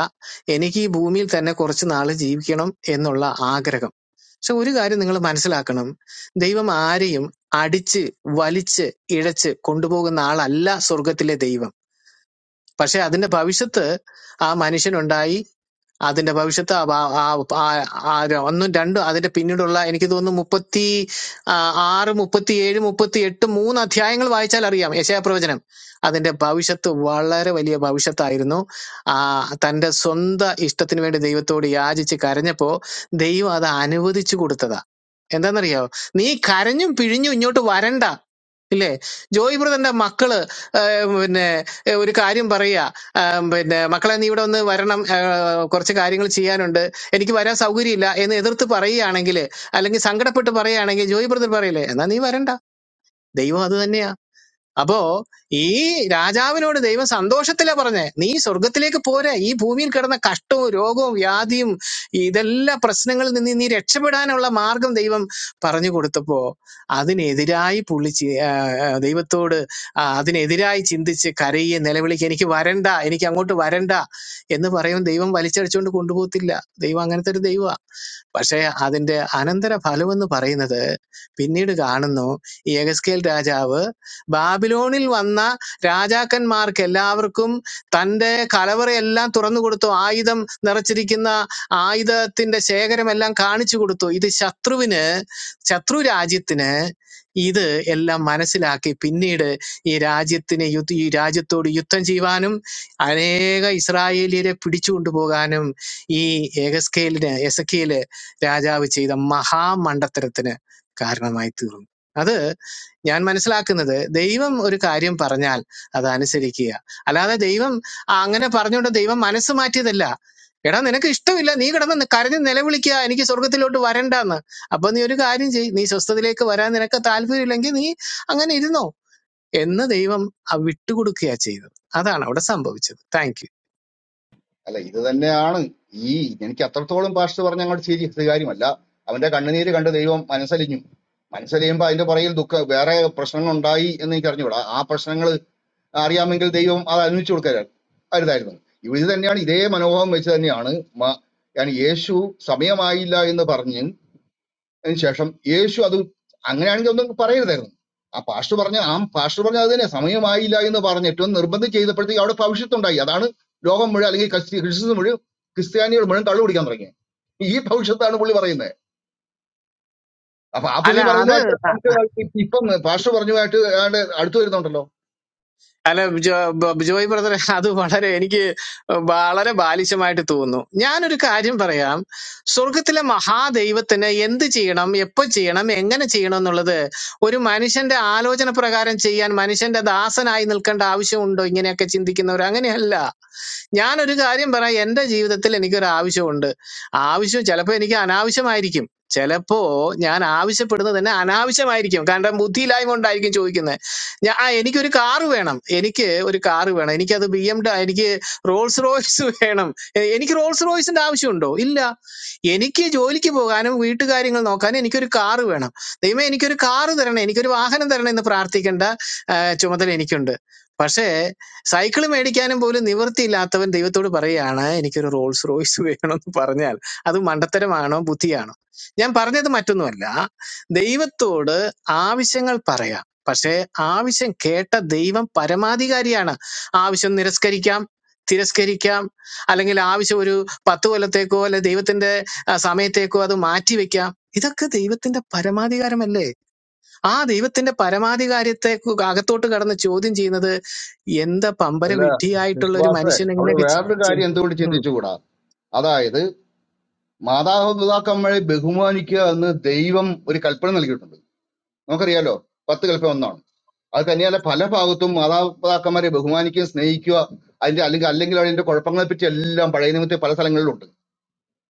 Speaker 6: എനിക്ക് ഈ ഭൂമിയിൽ തന്നെ കുറച്ച് നാൾ ജീവിക്കണം എന്നുള്ള ആഗ്രഹം പക്ഷെ ഒരു കാര്യം നിങ്ങൾ മനസ്സിലാക്കണം ദൈവം ആരെയും അടിച്ച് വലിച്ച് ഇഴച്ച് കൊണ്ടുപോകുന്ന ആളല്ല സ്വർഗത്തിലെ ദൈവം പക്ഷെ അതിന്റെ ഭവിഷ്യത്ത് ആ മനുഷ്യനുണ്ടായി അതിന്റെ ഭവിഷ്യത്ത് ആ ഭാ- ആ- ആ- ആ ര- ഒന്നും രണ്ടും അതിന്റെ പിന്നീടുള്ള എനിക്ക് തോന്നുന്നു മുപ്പത്തി ആ, ആറ് മുപ്പത്തി ഏഴ് മുപ്പത്തി എട്ട് മൂന്ന് അധ്യായങ്ങൾ വായിച്ചാൽ അറിയാം യശയാ പ്രവചനം അതിന്റെ ഭവിഷ്യത്ത് വളരെ വലിയ ഭവിഷ്യത്തായിരുന്നു ആ തന്റെ സ്വന്തം ഇഷ്ടത്തിന് വേണ്ടി ദൈവത്തോട് യാചിച്ച് കരഞ്ഞപ്പോ ദൈവം അത് അനുവദിച്ചു കൊടുത്തതാ എന്താണെന്നറിയോ നീ കരഞ്ഞും പിഴിഞ്ഞും ഇങ്ങോട്ട് വരണ്ട ഇല്ലേ ജോയ് ബ്രദറിന്റെ മക്കള് ആ, പിന്നെ ഏ, ഒരു കാര്യം പറയുക ആ, പിന്നെ മക്കളെ നീ ഇവിടെ ഒന്ന് വരണം ആ, കുറച്ച് കാര്യങ്ങൾ ചെയ്യാനുണ്ട് എനിക്ക് വരാൻ സൗകര്യമില്ല എന്ന് എതിർത്ത് പറയുകയാണെങ്കിൽ അല്ലെങ്കിൽ സങ്കടപ്പെട്ട് പറയുകയാണെങ്കിൽ ജോയ് ബ്രദർ പറയില്ലേ എന്നാ നീ വരണ്ട ദൈവം അത് തന്നെയാ അപ്പോ ഈ രാജാവിനോട് ദൈവം സന്തോഷത്തിലാ പറഞ്ഞേ നീ സ്വർഗത്തിലേക്ക് പോരെ ഈ ഭൂമിയിൽ കിടന്ന കഷ്ടവും രോഗവും വ്യാധിയും ഇതെല്ലാം പ്രശ്നങ്ങളിൽ നിന്ന് നീ രക്ഷപ്പെടാനുള്ള മാർഗം ദൈവം പറഞ്ഞു കൊടുത്തപ്പോ അതിനെതിരായി പുള്ളി ആ ദൈവത്തോട് ആ അതിനെതിരായി ചിന്തിച്ച് കരയുകയും നിലവിളിക്കുക എനിക്ക് വരണ്ട എനിക്ക് അങ്ങോട്ട് വരണ്ട എന്ന് പറയും ദൈവം വലിച്ചടിച്ചുകൊണ്ട് കൊണ്ടുപോകത്തില്ല ദൈവം അങ്ങനത്തെ ഒരു ദൈവമാണ് പക്ഷേ അതിന്റെ അനന്തര ഫലം എന്ന് പറയുന്നത് പിന്നീട് കാണുന്നു ഈ യഗസ്കേൽ രാജാവ് ബാബിലോണിൽ വന്ന രാജാക്കന്മാർക്ക് എല്ലാവർക്കും തന്റെ കലവറയെല്ലാം തുറന്നു കൊടുത്തു ആയുധം നിറച്ചിരിക്കുന്ന ആയുധത്തിന്റെ ശേഖരമെല്ലാം കാണിച്ചു കൊടുത്തു ഇത് ശത്രുവിന് ശത്രു രാജ്യത്തിന് ഇത് എല്ലാം മനസ്സിലാക്കി പിന്നീട് ഈ രാജ്യത്തിന് യുദ്ധ ഈ രാജ്യത്തോട് യുദ്ധം ചെയ്യുവാനും അനേക ഇസ്രായേലിയരെ പിടിച്ചുകൊണ്ടു പോകാനും ഈ ഏകസ്കേലിന് എസക്കേല് രാജാവ് ചെയ്ത മഹാമണ്ടത്തരത്തിന് കാരണമായി തീർന്നു അത് ഞാൻ മനസ്സിലാക്കുന്നത് ദൈവം ഒരു കാര്യം പറഞ്ഞാൽ അത് അനുസരിക്കുക അല്ലാതെ ദൈവം ആ, അങ്ങനെ പറഞ്ഞുകൊണ്ട് ദൈവം മനസ്സ് മാറ്റിയതല്ല എടാ നിനക്ക് ഇഷ്ടമില്ല നീ കിടന്ന് നി- കരഞ്ഞ് നിലവിളിക്കുക എനിക്ക് സ്വർഗത്തിലോട്ട് വരണ്ടെന്ന് അപ്പൊ നീ ഒരു കാര്യം ചെയ് നീ സ്വസ്ഥതയിലേക്ക് വരാൻ നിനക്ക് താല്പര്യമില്ലെങ്കിൽ നീ അങ്ങനെ ഇരുന്നോ എന്ന് ദൈവം ആ വിട്ടുകൊടുക്കുകയാ ചെയ്തത് അതാണ് അവിടെ സംഭവിച്ചത് താങ്ക് യു
Speaker 5: അല്ല ഇത് തന്നെയാണ് ഈ എനിക്ക് അത്രത്തോളം പാസ്റ്റ് പറഞ്ഞ അങ്ങോട്ട് ശരി കാര്യമല്ല അവന്റെ കണ്ണുനീര് കണ്ട് ദൈവം മനസ്സലിഞ്ഞു മനസ്സലിയുമ്പോ അതിന്റെ പുറകിൽ ദുഃഖ വേറെ പ്രശ്നങ്ങൾ ഉണ്ടായി എന്ന് എനിക്ക് അറിഞ്ഞുകൂടാ ആ പ്രശ്നങ്ങൾ അറിയാമെങ്കിൽ ദൈവം അത് അനുവദിച്ചു കൊടുക്കരുത് അരുതായിരുന്നു ഇവ ഇത് തന്നെയാണ് ഇതേ മനോഭാവം വെച്ച് തന്നെയാണ് മ- yani യേശു സമയമായില്ല എന്ന് പറഞ്ഞ് അതിന് ശേഷം യേശു അത് അങ്ങനെയാണെങ്കിൽ ഒന്നും പറയരുതായിരുന്നു ആ പാസ്റ്റർ പറഞ്ഞ ആ പാസ്റ്റർ പറഞ്ഞ അത് തന്നെ സമയമായില്ല എന്ന് പറഞ്ഞിട്ടും നിർബന്ധം ചെയ്തപ്പോഴത്തേക്ക് അവിടെ ഭവിഷ്യത്തുണ്ടായി അതാണ് ലോകം മുഴുവൻ അല്ലെങ്കിൽ ക്രിസ്തി- ക്രിസ്ത്യൻ മുഴുവൻ ക്രിസ്ത്യാനികൾ മുഴുവൻ കള്ളു പിടിക്കാൻ തുടങ്ങി ഈ ഭവിഷ്യത്താണ് പുള്ളി പറയുന്നത് അപ്പൊ ആ
Speaker 6: അല്ല
Speaker 5: പുള്ളി പറയുന്നതായിട്ട്
Speaker 6: അത്
Speaker 5: നമുക്ക് ഇപ്പം പാസ്റ്റർ പറഞ്ഞുമായിട്ട് ഏതാണ്ട് അടുത്ത് വരുന്നുണ്ടല്ലോ
Speaker 6: അല്ല ജോ- ബ- ജോയ് ബ്രദറെ അത് വളരെ എനിക്ക് വളരെ ബാലിശമായിട്ട് തോന്നുന്നു ഞാനൊരു കാര്യം പറയാം സ്വർഗത്തിലെ മഹാദൈവത്തിന് എന്ത് ചെയ്യണം എപ്പോൾ ചെയ്യണം എങ്ങനെ ചെയ്യണം എന്നുള്ളത് ഒരു മനുഷ്യന്റെ ആലോചന പ്രകാരം ചെയ്യാൻ മനുഷ്യന്റെ ദാസനായി നിൽക്കേണ്ട ആവശ്യമുണ്ടോ ഇങ്ങനെയൊക്കെ ചിന്തിക്കുന്നവർ അങ്ങനെയല്ല ഞാനൊരു കാര്യം പറയാം എൻ്റെ ജീവിതത്തിൽ എനിക്കൊരു ആവശ്യമുണ്ട് ആവശ്യം ചിലപ്പോൾ എനിക്ക് അനാവശ്യമായിരിക്കും ചിലപ്പോ ഞാൻ ആവശ്യപ്പെടുന്നത് തന്നെ അനാവശ്യമായിരിക്കും കാരണം ബുദ്ധിയില്ലായ്മ കൊണ്ടായിരിക്കും ചോദിക്കുന്നത് ഞാൻ ആ എനിക്കൊരു കാറ് വേണം എനിക്ക് ഒരു കാറ് വേണം എനിക്കത് ബി എം എനിക്ക് റോൾസ് റോയ്സ് വേണം എ- എനിക്ക് റോൾസ് റോയ്സിന്റെ ആവശ്യമുണ്ടോ ഇല്ല എനിക്ക് ജോലിക്ക് പോകാനും വീട്ടുകാര്യങ്ങൾ നോക്കാനും എനിക്കൊരു കാറ് വേണം ദൈവമേ എനിക്കൊരു കാറ് തരണേ എനിക്കൊരു വാഹനം തരണേ എന്ന് പ്രാർത്ഥിക്കേണ്ട ചുമതല എനിക്കുണ്ട് പക്ഷേ സൈക്കിൾ മേടിക്കാനും പോലും നിവൃത്തിയില്ലാത്തവൻ ദൈവത്തോട് പറയുകയാണ് എനിക്കൊരു റോൾസ് റോയ്സ് വേണമെന്ന് പറഞ്ഞാൽ അത് മണ്ടത്തരമാണോ ബുദ്ധിയാണോ ഞാൻ പറഞ്ഞത് മറ്റൊന്നുമല്ല ദൈവത്തോട് ആവശ്യങ്ങൾ പറയാം പക്ഷേ ആവശ്യം കേട്ട ദൈവം പരമാധികാരിയാണ് ആവശ്യം നിരസ്കരിക്കാം തിരസ്കരിക്കാം അല്ലെങ്കിൽ ആവശ്യം ഒരു പത്ത് കൊല്ലത്തേക്കോ അല്ലെ ദൈവത്തിന്റെ ആ, സമയത്തേക്കോ അത് മാറ്റിവെക്കാം ഇതൊക്കെ ദൈവത്തിന്റെ പരമാധികാരമല്ലേ ആ ദൈവത്തിന്റെ പരമാധികാരത്തെ കു- അകത്തോട്ട് കടന്ന് ചോദ്യം ചെയ്യുന്നത് എന്താ പമ്പര
Speaker 5: അല്ല
Speaker 6: വിഡ്ഢിയായിട്ടുള്ള ഒരു
Speaker 5: വിശ്വാസേ
Speaker 6: മനുഷ്യൻ
Speaker 5: അവിടെ
Speaker 6: എങ്ങനെയൊക്കെ
Speaker 5: വേറൊരു കാര്യം എന്തുകൊണ്ട്
Speaker 6: ചെയ്യുന്നു
Speaker 5: ചിന്തിച്ചുകൂടാ അതായത് മാതാപിതാക്കന്മാരെ ബഹുമാനിക്കുക എന്ന് ദൈവം ഒരു കൽപ്പന നൽകിയിട്ടുണ്ട് നമുക്കറിയാലോ പത്ത് കൽപ്പന ഒന്നാണ് അത് തന്നെയല്ല പല ഭാഗത്തും മാതാപിതാക്കന്മാരെ ബഹുമാനിക്കുക സ്നേഹിക്കുക അതിന്റെ അല്ലെങ്കിൽ അല്ലെങ്കിൽ അതിന്റെ കുഴപ്പങ്ങളെ പറ്റി എല്ലാം പഴയ നിമിത്തെ പല സ്ഥലങ്ങളിലുണ്ട്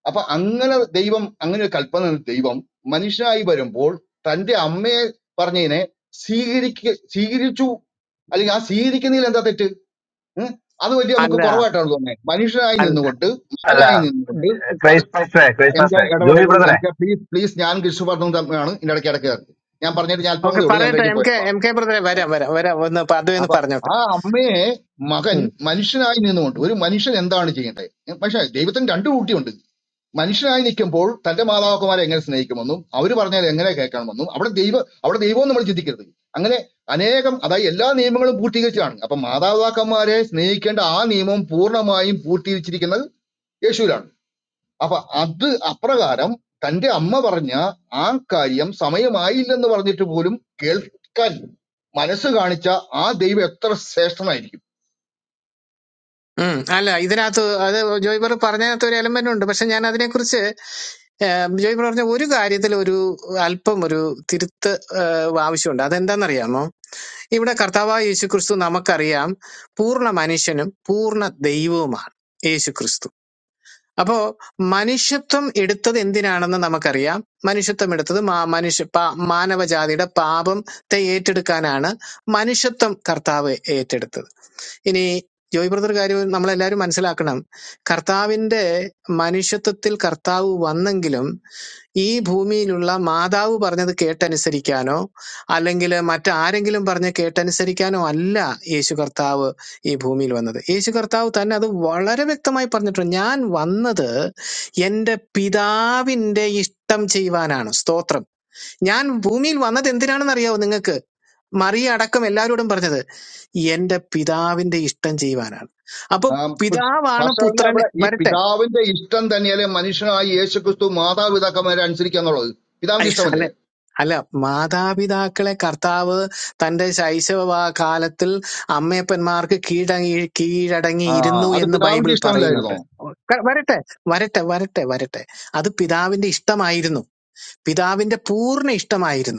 Speaker 5: അപ്പൊ അങ്ങനെ ദൈവം അങ്ങനെ ഒരു കൽപ്പന തന്ന ദൈവം മനുഷ്യനായി വരുമ്പോൾ തന്റെ അമ്മയെ പറഞ്ഞതിനെ സ്വീകരിക്ക സ്വീകരിച്ചു അല്ലെങ്കിൽ ആ സ്വീകരിക്കുന്നതിൽ എന്താ തെറ്റ് ഉം? അത് വലിയ നമുക്ക്
Speaker 6: അല്ല
Speaker 5: കുറവായിട്ടാണ് തോന്നുന്നത് മനുഷ്യനായി
Speaker 6: അല്ല
Speaker 5: നിന്നുകൊണ്ട്
Speaker 8: അല്ല
Speaker 5: മകനായി നിന്നുകൊണ്ട് അത്
Speaker 8: ക്രൈസ് പാസ്റ്ററെ ക്രൈസ്
Speaker 5: എം കെ
Speaker 8: പാസ്റ്ററെ ജോയി
Speaker 5: ഇടപെടൽ എം
Speaker 8: ബ്രദറെ
Speaker 5: കെ പ്ലീസ് പ്ലീസ് ഞാൻ കൃഷി പറഞ്ഞു തമ്മിലാണ് ഇതിന്റെ ഇടയ്ക്ക് ഇടയ്ക്ക് കയറുന്നത്. ഞാൻ പറഞ്ഞിട്ട് ഞാൻ അല്പം
Speaker 6: ഓക്കെ
Speaker 5: കൂടി ഉള്ളൂ ഞാൻ
Speaker 6: പറയട്ടെ
Speaker 5: കഴിഞ്ഞ്
Speaker 6: എം കെ
Speaker 5: പോയപ്പോ
Speaker 6: എം കെ ബ്രദറെ വരാം വരാം വരാം ഒന്ന് പ- അതും ഒന്ന്
Speaker 5: അപ്പൊ
Speaker 6: പറഞ്ഞോട്ടെ
Speaker 5: ആ അമ്മയെ മകൻ
Speaker 6: ഉം.
Speaker 5: മനുഷ്യനായി നിന്നുകൊണ്ട് ഒരു മനുഷ്യൻ എന്താണ് ചെയ്യേണ്ടത് പക്ഷെ ദൈവത്തിന് രണ്ടു കൂട്ടിയുണ്ട് മനുഷ്യനായി നിൽക്കുമ്പോൾ തന്റെ മാതാപിതാക്കന്മാരെ എങ്ങനെ സ്നേഹിക്കുമെന്നും അവർ പറഞ്ഞാൽ എങ്ങനെ കേൾക്കണമെന്നും അവിടെ ദൈവ അവിടെ ദൈവവും നമ്മൾ ചിന്തിക്കരുത് അങ്ങനെ അനേകം അതായത് എല്ലാ നിയമങ്ങളും പൂർത്തീകരിച്ചതാണ് അപ്പൊ മാതാപിതാക്കന്മാരെ സ്നേഹിക്കേണ്ട ആ നിയമം പൂർണ്ണമായും പൂർത്തീകരിച്ചിരിക്കുന്നത് യേശുവിലാണ് അപ്പൊ അത് അപ്രകാരം തന്റെ അമ്മ പറഞ്ഞ ആ കാര്യം സമയമായില്ലെന്ന് പറഞ്ഞിട്ട് പോലും കേൾക്കാൻ മനസ്സ് കാണിച്ച ആ ദൈവം എത്ര ശ്രേഷ്ഠനായിരിക്കും
Speaker 6: ഉം. അല്ല ഇതിനകത്ത് അത് ജോയ് ബ്രദർ പറഞ്ഞതിനകത്ത് ഒരു എലമെന്റ് ഉണ്ട് പക്ഷെ ഞാൻ അതിനെക്കുറിച്ച് ഏം, ജോയ് ബ്രദർ പറഞ്ഞ ഒരു കാര്യത്തിൽ ഒരു അല്പം ഒരു തിരുത്ത് ഏഹ്, ആവശ്യമുണ്ട് അതെന്താണെന്നറിയാമോ ഇവിടെ കർത്താവായ യേശു ക്രിസ്തു നമുക്കറിയാം പൂർണ്ണ മനുഷ്യനും പൂർണ്ണ ദൈവവുമാണ് യേശു അപ്പോ മനുഷ്യത്വം എടുത്തത് എന്തിനാണെന്ന് നമുക്കറിയാം മനുഷ്യത്വം എടുത്തത് മാ- മനുഷ്യ പാ- മാനവജാതിയുടെ പാപത്തെ ഏറ്റെടുക്കാനാണ് മനുഷ്യത്വം കർത്താവ് ഏറ്റെടുത്തത് ഇനി ജോയ് ബ്രദർ കാര്യം നമ്മളെല്ലാവരും മനസ്സിലാക്കണം കർത്താവിന്റെ മനുഷ്യത്വത്തിൽ കർത്താവ് വന്നെങ്കിലും ഈ ഭൂമിയിലുള്ള മാതാവ് പറഞ്ഞത് കേട്ടനുസരിക്കാനോ അല്ലെങ്കിൽ മറ്റാരെങ്കിലും പറഞ്ഞ് കേട്ടനുസരിക്കാനോ അല്ല യേശു കർത്താവ് ഈ ഭൂമിയിൽ വന്നത് യേശു കർത്താവ് തന്നെ അത് വളരെ വ്യക്തമായി പറഞ്ഞിട്ടുണ്ട് ഞാൻ വന്നത് എൻ്റെ പിതാവിൻ്റെ ഇഷ്ടം ചെയ്യുവാനാണ് സ്തോത്രം ഞാൻ ഭൂമിയിൽ വന്നത് എന്തിനാണെന്ന് അറിയാവോ നിങ്ങൾക്ക് മറിയ അടക്കം എല്ലാവരോടും പറഞ്ഞത് എന്റെ പിതാവിന്റെ ഇഷ്ടം ചെയ്യുവാനാണ് അപ്പൊ പിതാവാണ്
Speaker 5: ഭക്ഷണ
Speaker 6: പുത്രനെ
Speaker 5: അവിടെ ഈ
Speaker 6: വരട്ടെ
Speaker 5: പിതാവിന്റെ ഇഷ്ടം തന്നെയല്ലേ മനുഷ്യനായ യേശുക്രിസ്തു മാതാപിതാക്കന്മാരെ അനുസരിക്കുക എന്നുള്ളത്
Speaker 6: ഐ,
Speaker 5: പിതാവിന്റെ
Speaker 6: അല്ല
Speaker 5: ഇഷ്ടമല്ലേ
Speaker 6: അല്ല മാതാപിതാക്കളെ കർത്താവ് തന്റെ ശൈശവ കാലത്തിൽ അമ്മയപ്പന്മാർക്ക് കീഴടങ്ങി
Speaker 5: ആ
Speaker 6: കീഴടങ്ങിയിരുന്നു
Speaker 5: അത്
Speaker 6: എന്ന് ബൈബിൾ
Speaker 5: പിതാവിന്റെ
Speaker 6: പറയുന്നുണ്ട്
Speaker 5: ഇഷ്ടമല്ലായിരുന്നോ
Speaker 6: ക- വരട്ടെ വരട്ടെ വരട്ടെ വരട്ടെ അത് പിതാവിന്റെ ഇഷ്ടമായിരുന്നു പിതാവിന്റെ പൂർണ്ണ ഇഷ്ടമായിരുന്നു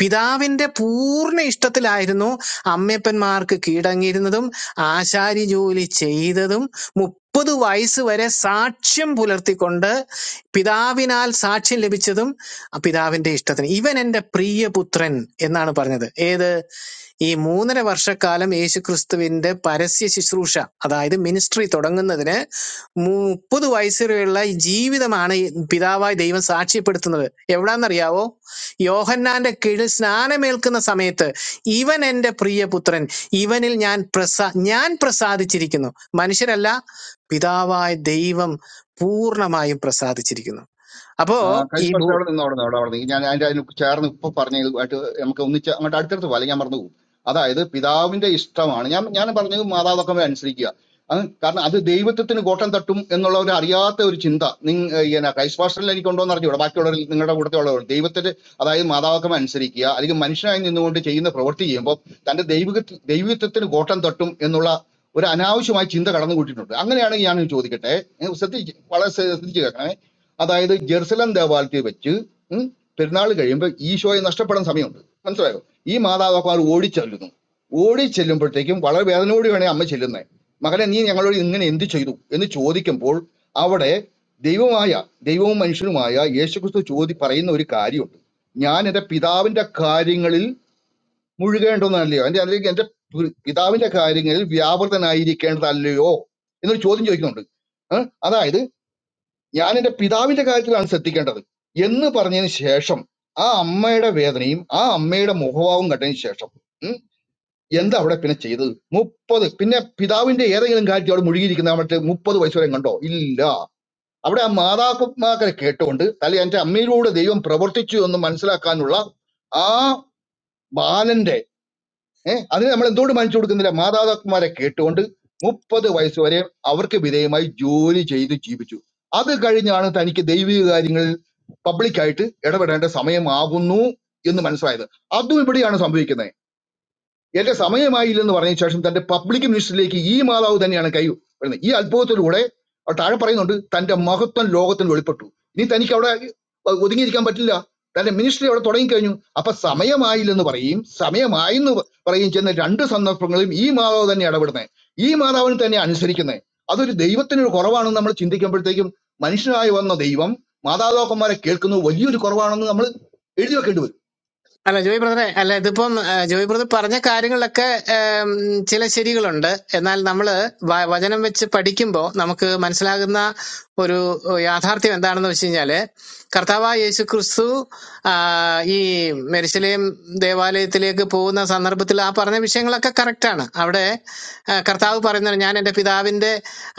Speaker 6: പിതാവിന്റെ പൂർണ്ണ ഇഷ്ടത്തിലായിരുന്നു അമ്മയപ്പന്മാർക്ക് കീഴടങ്ങിയിരുന്നതും ആശാരി ജോലി ചെയ്തതും മുപ്പത് വയസ്സ് വരെ സാക്ഷ്യം പുലർത്തിക്കൊണ്ട് പിതാവിനാൽ സാക്ഷ്യം ലഭിച്ചതും ആ പിതാവിന്റെ ഇഷ്ടത്തിന് ഇവൻ എന്റെ പ്രിയപുത്രൻ എന്നാണ് പറഞ്ഞത് ഏത് ഈ മൂന്നര വർഷക്കാലം യേശുക്രിസ്തുവിന്റെ പരസ്യ ശുശ്രൂഷ അതായത് മിനിസ്ട്രി തുടങ്ങുന്നതിന് മുപ്പത് വയസ്സ് വരെയുള്ള ഈ ജീവിതമാണ് ഈ പിതാവായി ദൈവം സാക്ഷ്യപ്പെടുത്തുന്നത് എവിടാന്നറിയാവോ യോഹന്നാന്റെ കീഴിൽ സ്നാനമേൽക്കുന്ന സമയത്ത് ഇവൻ എൻ്റെ പ്രിയപുത്രൻ ഇവനിൽ ഞാൻ പ്രസാ ഞാൻ പ്രസാദിച്ചിരിക്കുന്നു മനുഷ്യരല്ല പിതാവായ ദൈവം പൂർണ്ണമായും പ്രസാദിച്ചിരിക്കുന്നു അപ്പോ
Speaker 5: ആ,
Speaker 6: ഈ
Speaker 5: ക്രൈസ്റ്റ്
Speaker 6: ഭൂ
Speaker 5: പക്ഷേ അവിടെ നിന്ന് അവിടെ നിന്ന് അവിടെ അവിടെ നിന്ന് ഞാൻ അതിന്റെ അതിന് ചേർന്ന് ഇപ്പൊ പറഞ്ഞ ഇതുമായിട്ട് നമുക്ക് ഒന്നിച്ച് അങ്ങോട്ട് അടുത്തടുത്ത് പോലെ ഞാൻ പറഞ്ഞു പോകും അതായത് പിതാവിന്റെ ഇഷ്ടമാണ് ഞാൻ ഞാൻ പറഞ്ഞത് മാതാപിതാക്കളെ അനുസരിക്കുക അത് കാരണം അത് ദൈവത്വത്തിന് കോട്ടം തട്ടും എന്നുള്ള ഒരു അറിയാത്ത ഒരു ചിന്ത നിങ്ങ ഇങ്ങനെ ക്രൈസ്റ്റ് പാസ്റ്ററിൽ എനിക്ക് ഉണ്ടോ എന്ന് അറിഞ്ഞൂടാ ബാക്കിയുള്ളവർ നിങ്ങളുടെ കൂടെ ഉള്ളവർ ദൈവത്തിന് അതായത് മാതാപിതാക്കളെ അനുസരിക്കുക അല്ലെങ്കിൽ മനുഷ്യനായി നിന്നുകൊണ്ട് ചെയ്യുന്ന പ്രവൃത്തി ചെയ്യുമ്പോൾ തന്റെ ദൈവിക ദൈവത്വത്തിന് കോട്ടം തട്ടും എന്നുള്ള ഒരു അനാവശ്യമായ ചിന്ത കടന്നു കൂട്ടിയിട്ടുണ്ട് അങ്ങനെയാണെങ്കിൽ ഞാൻ ചോദിക്കട്ടെ ഏ, ശ്രദ്ധിച്ച് വളരെ ശ്രദ്ധിച്ച് കേൾക്കണേ അതായത് ജെറുസലം ദേവാലയത്തിൽ വെച്ച് ഉം, പെരുന്നാൾ കഴിയുമ്പോൾ ഈശോയെ നഷ്ടപ്പെടാൻ സമയമുണ്ട് മനസ്സിലായോ ഈ മാതാപിതാക്കന്മാർ ഓടിച്ചെല്ലുന്നു ഓടിച്ചെല്ലുമ്പോഴത്തേക്കും വളരെ വേദനയോടെ വേണേ അമ്മ ചെല്ലുന്നത് മകനെ നീ ഞങ്ങളോട് ഇങ്ങനെ എന്ത് ചെയ്തു എന്ന് ചോദിക്കുമ്പോൾ അവിടെ ദൈവമായ ദൈവവും മനുഷ്യനുമായ യേശുക്രിസ്തു ചോദി പറയുന്ന ഒരു കാര്യമുണ്ട് ഞാൻ എൻ്റെ പിതാവിൻ്റെ കാര്യങ്ങളിൽ മുഴുകേണ്ടതല്ലയോ എൻ്റെ അല്ലെങ്കിൽ എൻ്റെ പി- പിതാവിൻ്റെ കാര്യങ്ങളിൽ വ്യാപൃതനായിരിക്കേണ്ടതല്ലയോ എന്നൊരു ചോദ്യം ചോദിക്കുന്നുണ്ട് ഏഹ്? അതായത് ഞാൻ എന്റെ പിതാവിന്റെ കാര്യത്തിലാണ് ശ്രദ്ധിക്കേണ്ടത് എന്ന് പറഞ്ഞതിന് ശേഷം ആ അമ്മയുടെ വേദനയും ആ അമ്മയുടെ മുഖഭാവവും കണ്ടതിന് ശേഷം ഉം, എന്താ അവിടെ പിന്നെ ചെയ്തത് മുപ്പത് പിന്നെ പിതാവിന്റെ ഏതെങ്കിലും കാര്യത്തിൽ അവിടെ മുഴുകിയിരിക്കുന്ന മറ്റേ മുപ്പത് വയസ്സ് വരെ കണ്ടോ ഇല്ല അവിടെ ആ മാതാപിതാക്കളെ കേട്ടുകൊണ്ട് അല്ലെ എന്റെ അമ്മയിലൂടെ ദൈവം പ്രവർത്തിച്ചു എന്ന് മനസ്സിലാക്കാനുള്ള ആ ബാലന്റെ ഏഹ് അതിന് നമ്മൾ എന്തുകൊണ്ട് മാനിച്ചു കൊടുക്കുന്നില്ല മാതാപിതാക്കന്മാരെ കേട്ടുകൊണ്ട് മുപ്പത് വയസ്സ് വരെ അവർക്ക് വിധേയമായി ജോലി ചെയ്ത് ജീവിച്ചു അത് കഴിഞ്ഞാണ് തനിക്ക് ദൈവിക കാര്യങ്ങളിൽ പബ്ലിക്കായിട്ട് ഇടപെടേണ്ട സമയമാകുന്നു എന്ന് മനസ്സിലായത് അതും ഇവിടെയാണ് സംഭവിക്കുന്നത് എന്റെ സമയമായില്ലെന്ന് പറഞ്ഞ ശേഷം തന്റെ പബ്ലിക് മിനിസ്റ്ററിലേക്ക് ഈ മാതാവ് തന്നെയാണ് കൈ വരുന്നത് ഈ അത്ഭുതത്തിലൂടെ അവിടെ താഴെ പറയുന്നുണ്ട് തന്റെ മഹത്വം ലോകത്തിന് വെളിപ്പെട്ടു ഇനി തനിക്ക് അവിടെ ഒതുങ്ങിയിരിക്കാൻ പറ്റില്ല തന്റെ മിനിസ്റ്ററി അവിടെ തുടങ്ങിക്കഴിഞ്ഞു അപ്പൊ സമയമായില്ലെന്ന് പറയും സമയമായെന്ന് പ- പറയും ചെയ്യുന്ന രണ്ട് സന്ദർഭങ്ങളിലും ഈ മാതാവ് തന്നെ ഇടപെടുന്നത് ഈ മാതാവിന് തന്നെ അനുസരിക്കുന്നത് അതൊരു ദൈവത്തിന് ഒരു കുറവാണെന്ന് നമ്മൾ ചിന്തിക്കുമ്പോഴത്തേക്കും മനുഷ്യനായി വന്ന ദൈവം മാതാപിതാക്കന്മാരെ കേൾക്കുന്നത് വലിയൊരു കുറവാണെന്ന് നമ്മൾ എഴുതി വെക്കേണ്ടി വരും
Speaker 6: അല്ല ജോയ് ബ്രദറെ അല്ല ഇതിപ്പം ആ, ജോയ് ബ്രദർ പറഞ്ഞ കാര്യങ്ങളിലൊക്കെ ഉം, ചില ശരികളുണ്ട് എന്നാൽ നമ്മൾ വചനം വെച്ച് പഠിക്കുമ്പോൾ നമുക്ക് മനസ്സിലാകുന്ന ഒരു യാഥാർത്ഥ്യം എന്താണെന്ന് വെച്ച് കഴിഞ്ഞാല് കർത്താവായ യേശു ക്രിസ്തു ആ, ഈ മെരിശലേം ദേവാലയത്തിലേക്ക് പോകുന്ന സന്ദർഭത്തിൽ ആ പറഞ്ഞ വിഷയങ്ങളൊക്കെ കറക്റ്റാണ് അവിടെ ആ, കർത്താവ് പറയുന്നത് ഞാൻ എൻ്റെ പിതാവിൻ്റെ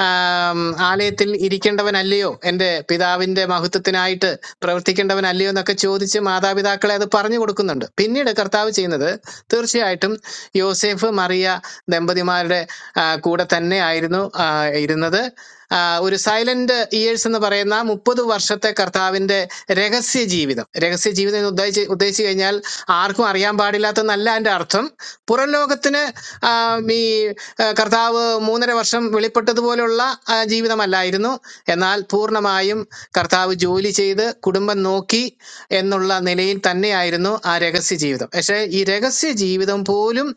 Speaker 6: ആം, ആലയത്തിൽ ഇരിക്കേണ്ടവനല്ലയോ എൻ്റെ പിതാവിൻ്റെ മഹത്വത്തിനായിട്ട് പ്രവർത്തിക്കേണ്ടവനല്ലയോ എന്നൊക്കെ ചോദിച്ച് മാതാപിതാക്കളെ അത് പറഞ്ഞു കൊടുക്കുന്നുണ്ട് പിന്നീട് കർത്താവ് ചെയ്യുന്നത് തീർച്ചയായിട്ടും യോസേഫ് മറിയ ദമ്പതിമാരുടെ ആ, കൂടെ തന്നെ ആയിരുന്നു ആ, ഇരുന്നത് ആ, ഒരു സൈലന്റ് ഇയേഴ്സ് എന്ന് പറയുന്ന മുപ്പത് വർഷത്തെ കർത്താവിന്റെ രഹസ്യ ജീവിതം രഹസ്യ ജീവിതം എന്ന് ഉദ്ദേശിച്ച് ഉദ്ദേശിച്ചു കഴിഞ്ഞാൽ ആർക്കും അറിയാൻ പാടില്ലാത്തതെന്നല്ല എൻ്റെ അർത്ഥം പുറം ലോകത്തിന് ആ, ഈ ആ, കർത്താവ് മൂന്നര വർഷം വെളിപ്പെട്ടതുപോലുള്ള ആ, ജീവിതമല്ലായിരുന്നു എന്നാൽ പൂർണ്ണമായും കർത്താവ് ജോലി ചെയ്ത് കുടുംബം നോക്കി എന്നുള്ള നിലയിൽ തന്നെയായിരുന്നു ആ രഹസ്യ ജീവിതം പക്ഷേ ഈ രഹസ്യ ജീവിതം പോലും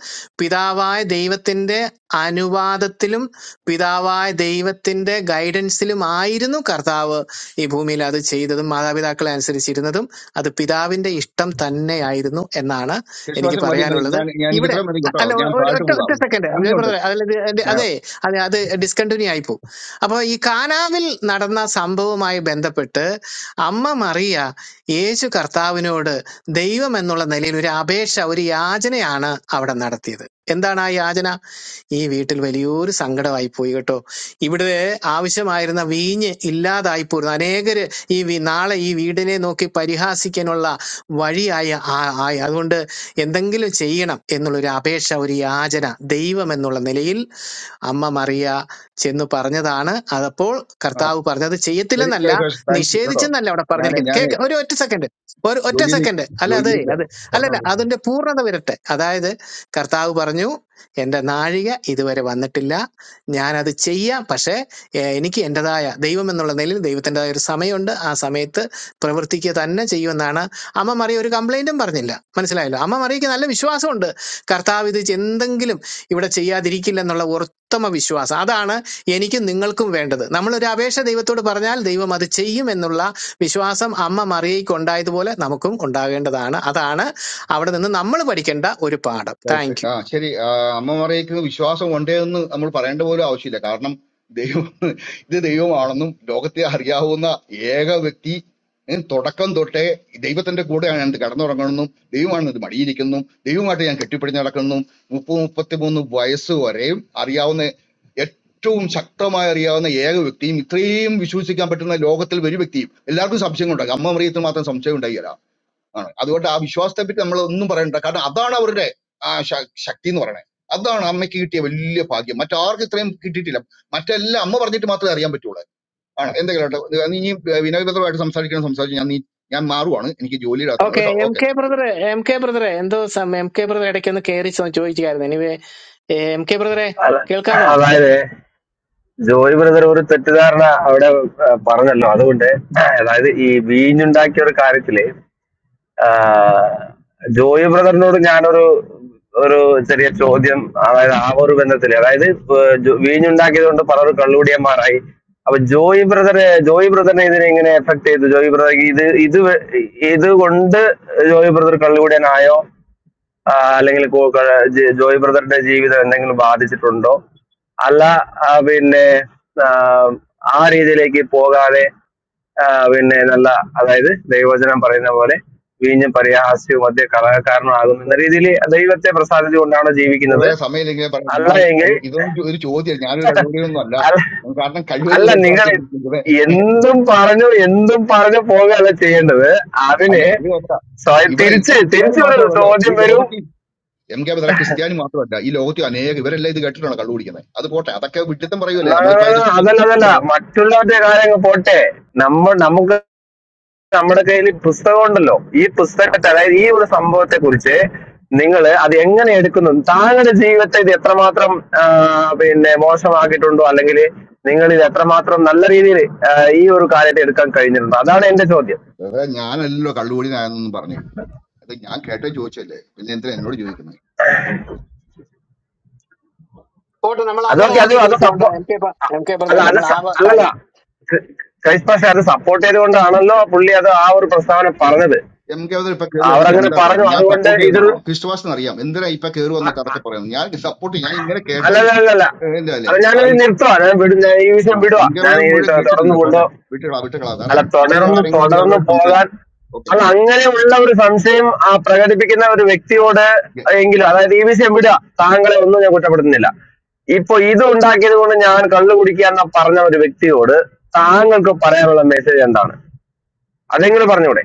Speaker 6: പിതാവായ ദൈവത്തിന്റെ അനുവാദത്തിലും പിതാവായ ദൈവത്തിന്റെ ഗൈഡൻസിലും ആയിരുന്നു കർത്താവ് ഈ ഭൂമിയിൽ അത് ചെയ്തതും മാതാപിതാക്കളെ അനുസരിച്ചിരുന്നതും അത് പിതാവിന്റെ ഇഷ്ടം തന്നെയായിരുന്നു എന്നാണ് എനിക്ക്
Speaker 5: ക്രിസ്തുവാസ മതി മതി
Speaker 6: പറയാനുള്ളത്
Speaker 5: ഞാൻ ഞാൻ എനിക്ക്
Speaker 6: ഇവിടെ
Speaker 5: ഇത്ര മതി
Speaker 6: അ-
Speaker 5: കേട്ടോ
Speaker 6: അല്ല
Speaker 5: ഞാൻ
Speaker 6: ഒ- ഒരു
Speaker 5: പാട്ട്
Speaker 6: ഒറ്റ ഒറ്റ
Speaker 5: പോവാം
Speaker 6: സെക്കൻഡ്
Speaker 5: നന്ദിയുണ്ട്
Speaker 6: ബ്രദറെ അതിൽ ഇത് എന്റെ- അതെ
Speaker 5: ഞാൻ-
Speaker 6: അതെ അത് ഡിസ്കണ്ടിന്യൂ ആയിപ്പോ അപ്പൊ ഈ കാനാവിൽ നടന്ന സംഭവവുമായി ബന്ധപ്പെട്ട് അമ്മ മറിയ യേശു കർത്താവിനോട് ദൈവം എന്നുള്ള നിലയിൽ ഒരു അപേക്ഷ ഒരു യാചനയാണ് അവിടെ നടത്തിയത് എന്താണ് ആ യാചന ഈ വീട്ടിൽ വലിയൊരു സങ്കടമായി പോയി കേട്ടോ ഇവിടെ ആവശ്യമായിരുന്ന വീഞ്ഞ് ഇല്ലാതായി പോരുന്നു അനേകര് ഈ വി- നാളെ ഈ വീടിനെ നോക്കി പരിഹാസിക്കാനുള്ള വഴിയായി ആ- ആയി അതുകൊണ്ട് എന്തെങ്കിലും ചെയ്യണം എന്നുള്ളൊരു അപേക്ഷ ഒരു യാചന ദൈവം എന്നുള്ള നിലയിൽ അമ്മ മറിയ ചെന്ന് പറഞ്ഞതാണ് അതപ്പോൾ
Speaker 5: ആ,
Speaker 6: കർത്താവ് പറഞ്ഞത്
Speaker 5: ശരി
Speaker 6: ചെയ്യത്തില്ലെന്നല്ല
Speaker 5: ക്രൈഫാസ് താങ്ക് യു കേട്ടോ
Speaker 6: നിഷേധിച്ചെന്നല്ല അവിടെ
Speaker 5: ഞാനേ
Speaker 6: പറഞ്ഞിരിക്കുന്നത്
Speaker 5: ഞാനേ
Speaker 6: കേക്ക് ഒരു ഒറ്റ സെക്കൻഡ് ഒരു ഒറ്റ
Speaker 5: ജോലിയിലേക്ക്
Speaker 6: സെക്കൻഡ് അല്ല അതെ
Speaker 5: ജോലിയിലേക്ക്
Speaker 6: അത്
Speaker 5: വരണം പറഞ്ഞോ
Speaker 6: അല്ലല്ല അതിന്റെ പൂർണ്ണത വരട്ടെ അതായത് കർത്താവ് പറഞ്ഞു എൻ്റെ നാഴിക ഇതുവരെ വന്നിട്ടില്ല ഞാനത് ചെയ്യാം പക്ഷേ ഏഹ്, എനിക്ക് എൻ്റെതായ ദൈവം എന്നുള്ള നിലയിൽ ദൈവത്തിൻ്റെതായ ഒരു സമയമുണ്ട് ആ സമയത്ത് പ്രവർത്തിക്കുക തന്നെ ചെയ്യുമെന്നാണ് അമ്മ മറിയ ഒരു കംപ്ലൈൻറ്റും പറഞ്ഞില്ല മനസ്സിലായല്ലോ അമ്മ മറിയയ്ക്ക് നല്ല വിശ്വാസമുണ്ട് കർത്താവ് ഇത് എന്തെങ്കിലും ഇവിടെ ചെയ്യാതിരിക്കില്ലെന്നുള്ള ഉത്തമ വിശ്വാസം അതാണ് എനിക്കും നിങ്ങൾക്കും വേണ്ടത് നമ്മളൊരു അപേക്ഷ ദൈവത്തോട് പറഞ്ഞാൽ ദൈവം അത് ചെയ്യും എന്നുള്ള വിശ്വാസം അമ്മ മറിയയ്ക്ക് ഉണ്ടായതുപോലെ നമുക്കും ഉണ്ടാകേണ്ടതാണ് അതാണ് അവിടെ നിന്ന് നമ്മൾ പഠിക്കേണ്ട ഒരു പാഠം
Speaker 5: Right.
Speaker 6: Thank you.
Speaker 5: ആ ശരി ആ, അമ്മ മറിയയ്ക്ക് വിശ്വാസം ഉണ്ടേ എന്ന് നമ്മൾ പറയേണ്ട പോലും ആവശ്യമില്ല കാരണം ദൈവം ഇത് ദൈവമാണെന്നും ലോകത്തെ അറിയാവുന്ന ഏക വ്യക്തി ഉം, തുടക്കം തൊട്ടേ ദൈവത്തിന്റെ കൂടെയാണ് ഞാൻ കടന്നുറങ്ങണമെന്നും ദൈവമാണ് ഇത് മടിയിരിക്കുന്നു ദൈവമായിട്ട് ഞാൻ കെട്ടിപ്പിടിച്ച് നടക്കുന്നു മുപ്പത് മുപ്പത്തിമൂന്ന് വയസ്സ് വരെയും അറിയാവുന്ന ഏറ്റവും ശക്തമായി അറിയാവുന്ന ഏക വ്യക്തിയും ഇത്രയും വിശ്വസിക്കാൻ പറ്റുന്ന ലോകത്തിൽ ഒരു വ്യക്തിയും എല്ലാവർക്കും സംശയം ഉണ്ടാകും അമ്മ മറിയത്തിന് മാത്രം സംശയം ഉണ്ടായില്ല ആണ് അതുകൊണ്ട് ആ വിശ്വാസത്തെ പറ്റി നമ്മൾ ഒന്നും പറയണ്ട കാരണം അതാണ് അവരുടെ ആ ശ- ശക്തി എന്ന് പറയുന്നത് അതാണ് അമ്മയ്ക്ക് കിട്ടിയ വലിയ ഭാഗ്യം മറ്റാർക്കും ഇത്രയും കിട്ടിയിട്ടില്ല മറ്റെല്ലാം അമ്മ പറഞ്ഞിട്ട് മാത്രമേ അറിയാൻ പറ്റുള്ളൂ ആണ് എന്തെങ്കിലും കേട്ടോ ഇത് നീ വിനയഭദ്രമായിട്ട് സംസാരിക്കണം സംസാരിച്ച് ഞാൻ നീ ഞാൻ മാറുവാണ് എനിക്ക് ജോലിയുടെ അകത്താണ്
Speaker 6: ഓക്കെ
Speaker 5: കേട്ടോ
Speaker 6: എം
Speaker 5: ഓക്കെ
Speaker 6: കെ ബ്രദറെ എം കെ ബ്രദറെ എന്തോ സമയം എം കെ ബ്രദർ ഇടയ്ക്ക് ഒന്ന് കയറി ചോദിച്ചായിരുന്നു എനിവേ എം കെ ബ്രദറെ
Speaker 8: അത-
Speaker 6: കേൾക്കാമോ
Speaker 8: അതായത് ജോയി ബ്രദർ ഒരു തെറ്റിദ്ധാരണ അവിടെ ആ, പറഞ്ഞല്ലോ അതുകൊണ്ട് അതായത് ഈ വീഞ്ഞുണ്ടാക്കിയ ഒരു കാര്യത്തില് ആ, ജോയി ബ്രദറിനോട് ഞാനൊരു ഒരു ചെറിയ ചോദ്യം അതായത് ആ ഒരു ബന്ധത്തില് അതായത് ഇപ്പൊ ജോ- വീഞ്ഞുണ്ടാക്കിയത് കൊണ്ട് പലരും കള്ളുകൂടിയന്മാരായി അപ്പൊ ജോയി ബ്രദറെ ജോയി ബ്രദറിനെ ഇതിനെ എങ്ങനെ എഫക്ട് ചെയ്തു ജോയി ബ്രദർ ഇത് ഇത് വെ- ഇത് കൊണ്ട് ജോയി ബ്രദർ കള്ളുകൂടിയനായോ ആ, അല്ലെങ്കിൽ കോ- ക- ജെ- ജോയ് ബ്രദറിന്റെ ജീവിതം എന്തെങ്കിലും ബാധിച്ചിട്ടുണ്ടോ അല്ല ആ, പിന്നെ ആ, ആ രീതിയിലേക്ക് പോകാതെ ആ, പിന്നെ നല്ല അതായത് ദൈവവചനം പറയുന്ന പോലെ വീഞ്ഞും പരിഹാസ്യവും മധ്യ കളകാരണമാകുന്നു എന്ന രീതിയിൽ ദൈവത്തെ പ്രസാദിച്ചുകൊണ്ടാണോ ജീവിക്കുന്നത്
Speaker 5: സമയമില്ലെങ്കിൽ പറയാം
Speaker 8: അല്ല
Speaker 5: ഞാൻ
Speaker 8: എങ്കിൽ
Speaker 5: അത് ഇതൊന്നും ചോ- ഒരു ചോദ്യം ഞാനൊരു കണ്ണൂരിയൊന്നും അല്ല
Speaker 8: അല്ല
Speaker 5: കാരണം കഴിവത്
Speaker 8: അല്ല നിങ്ങൾ
Speaker 5: ഒഴിവാക്കി
Speaker 8: എന്തും പറഞ്ഞു എന്തും പറഞ്ഞു പോകുകയല്ല ചെയ്യേണ്ടത്
Speaker 5: അല്ല
Speaker 8: അതിന്
Speaker 5: ഇത് നോക്കാം
Speaker 8: സ്വയം
Speaker 5: ഇവിടെ ഇവിടെ
Speaker 8: തിരിച്ച്
Speaker 5: ക്രിസ്ത്യാനി
Speaker 8: തിരിച്ചൊരു
Speaker 5: മാത്രമാണല്ലോ ഈ
Speaker 8: ചോദ്യം വരും
Speaker 5: ലോകത്ത് എം കെ ബദല ക്രിസ്ത്യാനി മാത്രമല്ല ഈ ലോകത്തിൽ അനേകം ഇവരെല്ലാം ഇത് കേട്ടിട്ടാണ് കള്ളു കുടിക്കുന്നത് അത് പോട്ടെ അതൊക്കെ വിട്ടിത്തം പറയുമല്ലേ
Speaker 8: ന- ന-
Speaker 5: നമ്മളിപ്പോ
Speaker 8: ന- ന-
Speaker 5: അതിനെപ്പറ്റി
Speaker 8: അതല്ല അതല്ല
Speaker 5: എന്താ പറയുക?
Speaker 8: മറ്റുള്ളവരുടെ കാര്യങ്ങൾ പോട്ടെ നമ്മ നമുക്ക് നമ്മുടെ കയ്യിൽ ഈ പുസ്തകം ഉണ്ടല്ലോ ഈ പുസ്തകത്തെ അതായത് ഈ ഒരു സംഭവത്തെ കുറിച്ച് നിങ്ങൾ അത് എങ്ങനെ എടുക്കുന്നു താങ്കളുടെ ജീവിതത്തെ ഇത് എത്രമാത്രം ആ, പിന്നെ മോശമാക്കിയിട്ടുണ്ടോ അല്ലെങ്കിൽ നിങ്ങൾ ഇത് എത്രമാത്രം നല്ല രീതിയിൽ ഈ ഒരു കാര്യത്തെ എടുക്കാൻ കഴിഞ്ഞിട്ടുണ്ടോ അതാണ് എന്റെ ചോദ്യം
Speaker 5: വേറെ ഞാനല്ലോ കള്ളുകുടിനായെന്നൊന്നും പറഞ്ഞു അത് ഞാൻ കേട്ടേ ചോദിച്ചല്ലേ പിന്നെ എന്തിനാ എന്നോട് ചോദിക്കുന്നത്
Speaker 6: പോട്ടെ നമ്മൾ അങ്ങനെ
Speaker 8: അതൊക്കെ
Speaker 6: ആ
Speaker 8: അത്
Speaker 6: രീതിയിൽ
Speaker 8: അത്
Speaker 6: പോകണ്ട
Speaker 8: സപ്പോ
Speaker 6: എം കെ ബ-
Speaker 8: അ-
Speaker 6: എം കെ
Speaker 8: അല്ല
Speaker 6: ബ്രദറെ
Speaker 8: അത്
Speaker 6: നമ്മൾ ആ
Speaker 8: സ-
Speaker 6: കാര്യം
Speaker 8: അല്ലല്ല ക്രി- ക്രൈസ്റ്റ് പക്ഷെ അത് സപ്പോർട്ട് ചെയ്തുകൊണ്ടാണല്ലോ പുള്ളി അത് ആ ഒരു പ്രസ്താവന പറഞ്ഞത്
Speaker 5: എം കെ ബദൽ ഇപ്പൊ കയറി വന്നിട്ട്
Speaker 8: അവരങ്ങനെ
Speaker 5: എന്താ
Speaker 8: പറഞ്ഞു
Speaker 5: പറയുന്നത് ഞാൻ
Speaker 8: അതുകൊണ്ട്
Speaker 5: സപ്പോർട്ട്
Speaker 8: ഇതൊരു
Speaker 5: ചെയ്യുന്നതാണോ ക്രിസ്തുവാസിന് അറിയാം എന്തിനാ ഇപ്പൊ കയറി വന്നിട്ട് അതൊക്കെ പറയുന്നത് ഞാൻ സപ്പോർട്ട് ഞാൻ ഇങ്ങനെ
Speaker 8: അല്ല
Speaker 5: കേട്ട്
Speaker 8: അല്ല അല്ല, അല്ല
Speaker 5: എന്താ അല്ലേ
Speaker 8: അപ്പൊ ഞാനിത്
Speaker 5: ആര്
Speaker 8: നിർത്തുവാ ഞാൻ വിടും ഞാൻ ഈ
Speaker 5: ആ,
Speaker 8: വിഷയം വിടുവാ
Speaker 5: എം കെ
Speaker 8: ഞാൻ
Speaker 5: ബദൽ
Speaker 8: ഇത്
Speaker 5: മുഴുവൻ
Speaker 8: തൊ- തുടർന്ന്
Speaker 5: കേട്ടിട്ടില്ലല്ലോ പോട്ടെ
Speaker 8: കൊണ്ടോ
Speaker 5: വിട്ടുകളാ വിട്ടുകളാ വേറെ
Speaker 8: അല്ല
Speaker 5: മുകളിലുള്ള
Speaker 8: തുടർന്ന്
Speaker 5: ആരെങ്കിലും ഉണ്ടെങ്കിൽ
Speaker 8: തുടർന്ന്
Speaker 5: അവരോട്
Speaker 8: പോകാൻ
Speaker 5: സംസാരിച്ചു ഓക്കെ
Speaker 8: അത് അങ്ങനെയുള്ള ഒരു സംശയം ആ, പ്രകടിപ്പിക്കുന്ന ഒരു വ്യക്തിയോട് എങ്കിലും അതായത് ഈ വിഷയം വിടുക താങ്കളെ ഒന്നും ഞാൻ കുറ്റപ്പെടുത്തുന്നില്ല ഇപ്പൊ ഇത് ഉണ്ടാക്കിയത് കൊണ്ട് ഞാൻ കള്ളു കുടിക്കുക എന്ന പറഞ്ഞ ഒരു വ്യക്തിയോട് താങ്കൾക്ക് പറയാനുള്ള മെസ്സേജ് എന്താണ് അതെങ്കിലും പറഞ്ഞൂടെ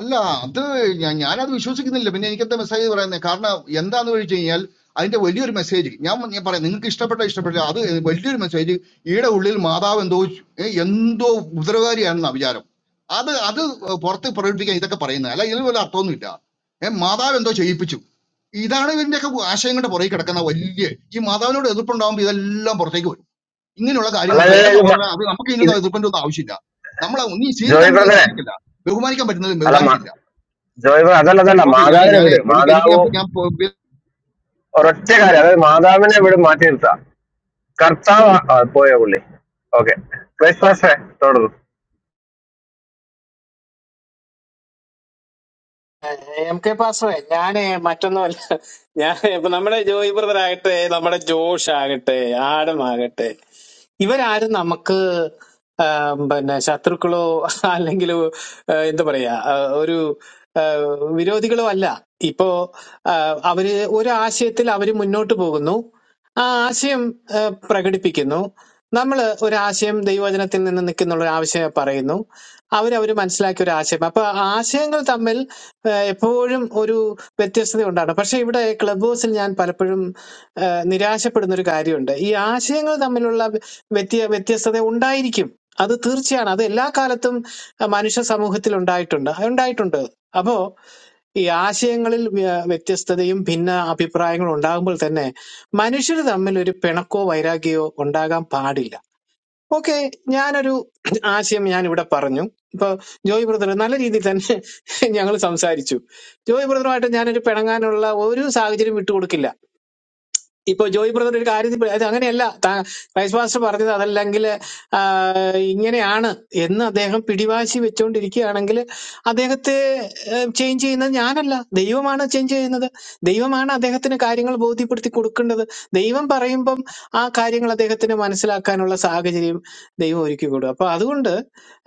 Speaker 5: അല്ല അത് ഞാൻ ഞാനത് വിശ്വസിക്കുന്നില്ല പിന്നെ എനിക്കത്തെ മെസ്സേജ് പറയുന്നത് കാരണം എന്താന്ന് ചോദിച്ചു കഴിഞ്ഞാൽ അതിന്റെ വലിയൊരു മെസ്സേജ് ഞാൻ ഞാൻ പറയാം നിങ്ങൾക്ക് ഇഷ്ടപ്പെട്ട ഇഷ്ടപ്പെട്ട അത് വലിയൊരു മെസ്സേജ് ഈടെ ഉള്ളിൽ മാതാവ് എന്തോ ഏ, എന്തോ ഉപദ്രവകാരിയാണെന്ന വിചാരം അത് അത് പുറത്ത് പ്രകടിപ്പിക്കാൻ ഇതൊക്കെ പറയുന്നത് അല്ല ഇതിൽ വല്ല അർത്ഥമൊന്നുമില്ല ഏഹ് മാതാവ് എന്തോ ചെയ്യിപ്പിച്ചു ഇതാണ് ഇതിന്റെയൊക്കെ ആശയങ്ങളുടെ പുറകെ കിടക്കുന്ന വലിയ ഈ മാതാവിനോട് എതിർപ്പുണ്ടാകുമ്പോൾ ഇതെല്ലാം പുറത്തേക്ക് വരും ഇങ്ങനെയുള്ള കാര്യങ്ങളൊക്കെ
Speaker 8: അല്ലാതെ
Speaker 5: എന്റെ
Speaker 8: ഇത് മ-
Speaker 5: സഹോദരൻ അത് നമുക്ക്
Speaker 8: ഇത്
Speaker 5: ഇതിനൊന്നും എതിർപ്പിന്റെ ഒന്നും ആവശ്യമില്ല നമ്മളെ നീ സ്വീകരിക്കാൻ
Speaker 8: ജോയ്
Speaker 5: പറ്റുന്നത്
Speaker 8: ബ്രദറെ
Speaker 5: സ്വീകരിക്കില്ല ബഹുമാനിക്കാൻ പറ്റുന്നത്
Speaker 8: അല്ല മ-
Speaker 5: ബഹുമാനിക്കില്ല
Speaker 8: ജോയ് ബ്രദർ അതല്ല അതല്ല
Speaker 5: Okay, nyanyi,
Speaker 8: മാതാവിനെ
Speaker 5: nyanyi,
Speaker 8: വിട്
Speaker 5: ni, ni, ni,
Speaker 8: മാതാവ്
Speaker 5: nyampu, nyampu, biar.
Speaker 8: ഒരൊറ്റ കാര്യം അതായത് മാതാവിനെ ഇവിടെ മാറ്റി നിർത്താം കർത്താവ് ആ, പോയോ പുള്ളി ഓക്കെ ക്രൈസ്റ്റ് പാസ്റ്ററെ തുടർന്നു
Speaker 6: എം കെ പാസ്റ്ററെ ഞാനേ മറ്റൊന്നുമല്ല ഞാൻ ഇപ്പൊ നമ്മുടെ ജോയി ബ്രദർ ആകട്ടെ നമ്മുടെ ജോഷ് ആകട്ടെ ആഡം ആകട്ടെ ഇവരാരും നമുക്ക് ആം, പിന്നെ ശത്രുക്കളോ അല്ലെങ്കിൽ എന്താ പറയാ ആ, ഒരു ആ, വിരോധികളോ അല്ല ഇപ്പോ ആ, അവര് ഒരു ആശയത്തിൽ അവര് മുന്നോട്ട് പോകുന്നു ആ ആശയം ആ, പ്രകടിപ്പിക്കുന്നു നമ്മൾ ഒരു ആശയം ദൈവവചനത്തിൽ നിന്ന് നിൽക്കുന്നുള്ള ഒരു ആവശ്യം പറയുന്നു അവരവർ മനസ്സിലാക്കിയ ഒരു ആശയം അപ്പൊ ആശയങ്ങൾ തമ്മിൽ ഏഹ് എപ്പോഴും ഒരു വ്യത്യസ്തത ഉണ്ടാകണം പക്ഷെ ഇവിടെ ക്ലബ് ഹൗസിൽ ഞാൻ പലപ്പോഴും ഏഹ് നിരാശപ്പെടുന്ന ഒരു കാര്യമുണ്ട് ഈ ആശയങ്ങൾ തമ്മിലുള്ള വ്യത്യ വ്യത്യസ്തത ഉണ്ടായിരിക്കും അത് തീർച്ചയാണ് അത് എല്ലാ കാലത്തും അഹ് മനുഷ്യ സമൂഹത്തിൽ ഉണ്ടായിട്ടുണ്ട് ഉണ്ടായിട്ടുണ്ട് അപ്പോ ഈ ആശയങ്ങളിൽ വ്യ- വ്യത്യസ്തതയും ഭിന്ന അഭിപ്രായങ്ങളും ഉണ്ടാകുമ്പോൾ തന്നെ മനുഷ്യർ തമ്മിൽ ഒരു പിണക്കോ വൈരാഗ്യമോ ഉണ്ടാകാൻ പാടില്ല ഓക്കെ ഞാനൊരു ആശയം ഞാൻ ഇവിടെ പറഞ്ഞു ഇപ്പൊ ജോയ് ബ്രദർ നല്ല രീതിയിൽ തന്നെ ഞങ്ങൾ സംസാരിച്ചു ജോയ് ബ്രദറുമായിട്ട് ഞാനൊരു പിണങ്ങാനുള്ള ഒരു സാഹചര്യം വിട്ടുകൊടുക്കില്ല ഇപ്പൊ ജോയി ബ്രദർ ഒരു കാര്യത്തിൽ പ- അത് അങ്ങനെയല്ല താ- വൈസ് മാസ്റ്റർ പറഞ്ഞത് അതല്ലെങ്കിൽ ആ, ഇങ്ങനെയാണ് എന്ന് അദ്ദേഹം പിടിവാശി വെച്ചുകൊണ്ടിരിക്കുകയാണെങ്കിൽ അദ്ദേഹത്തെ ചേഞ്ച് ചെയ്യുന്നത് ഞാനല്ല ദൈവമാണ് ചേഞ്ച് ചെയ്യുന്നത് ദൈവമാണ് അദ്ദേഹത്തിന് കാര്യങ്ങൾ ബോധ്യപ്പെടുത്തി കൊടുക്കേണ്ടത് ദൈവം പറയുമ്പം ആ കാര്യങ്ങൾ അദ്ദേഹത്തിന് മനസ്സിലാക്കാനുള്ള സാഹചര്യം ദൈവം ഒരുക്കി കൊടുക്കും അപ്പൊ അതുകൊണ്ട്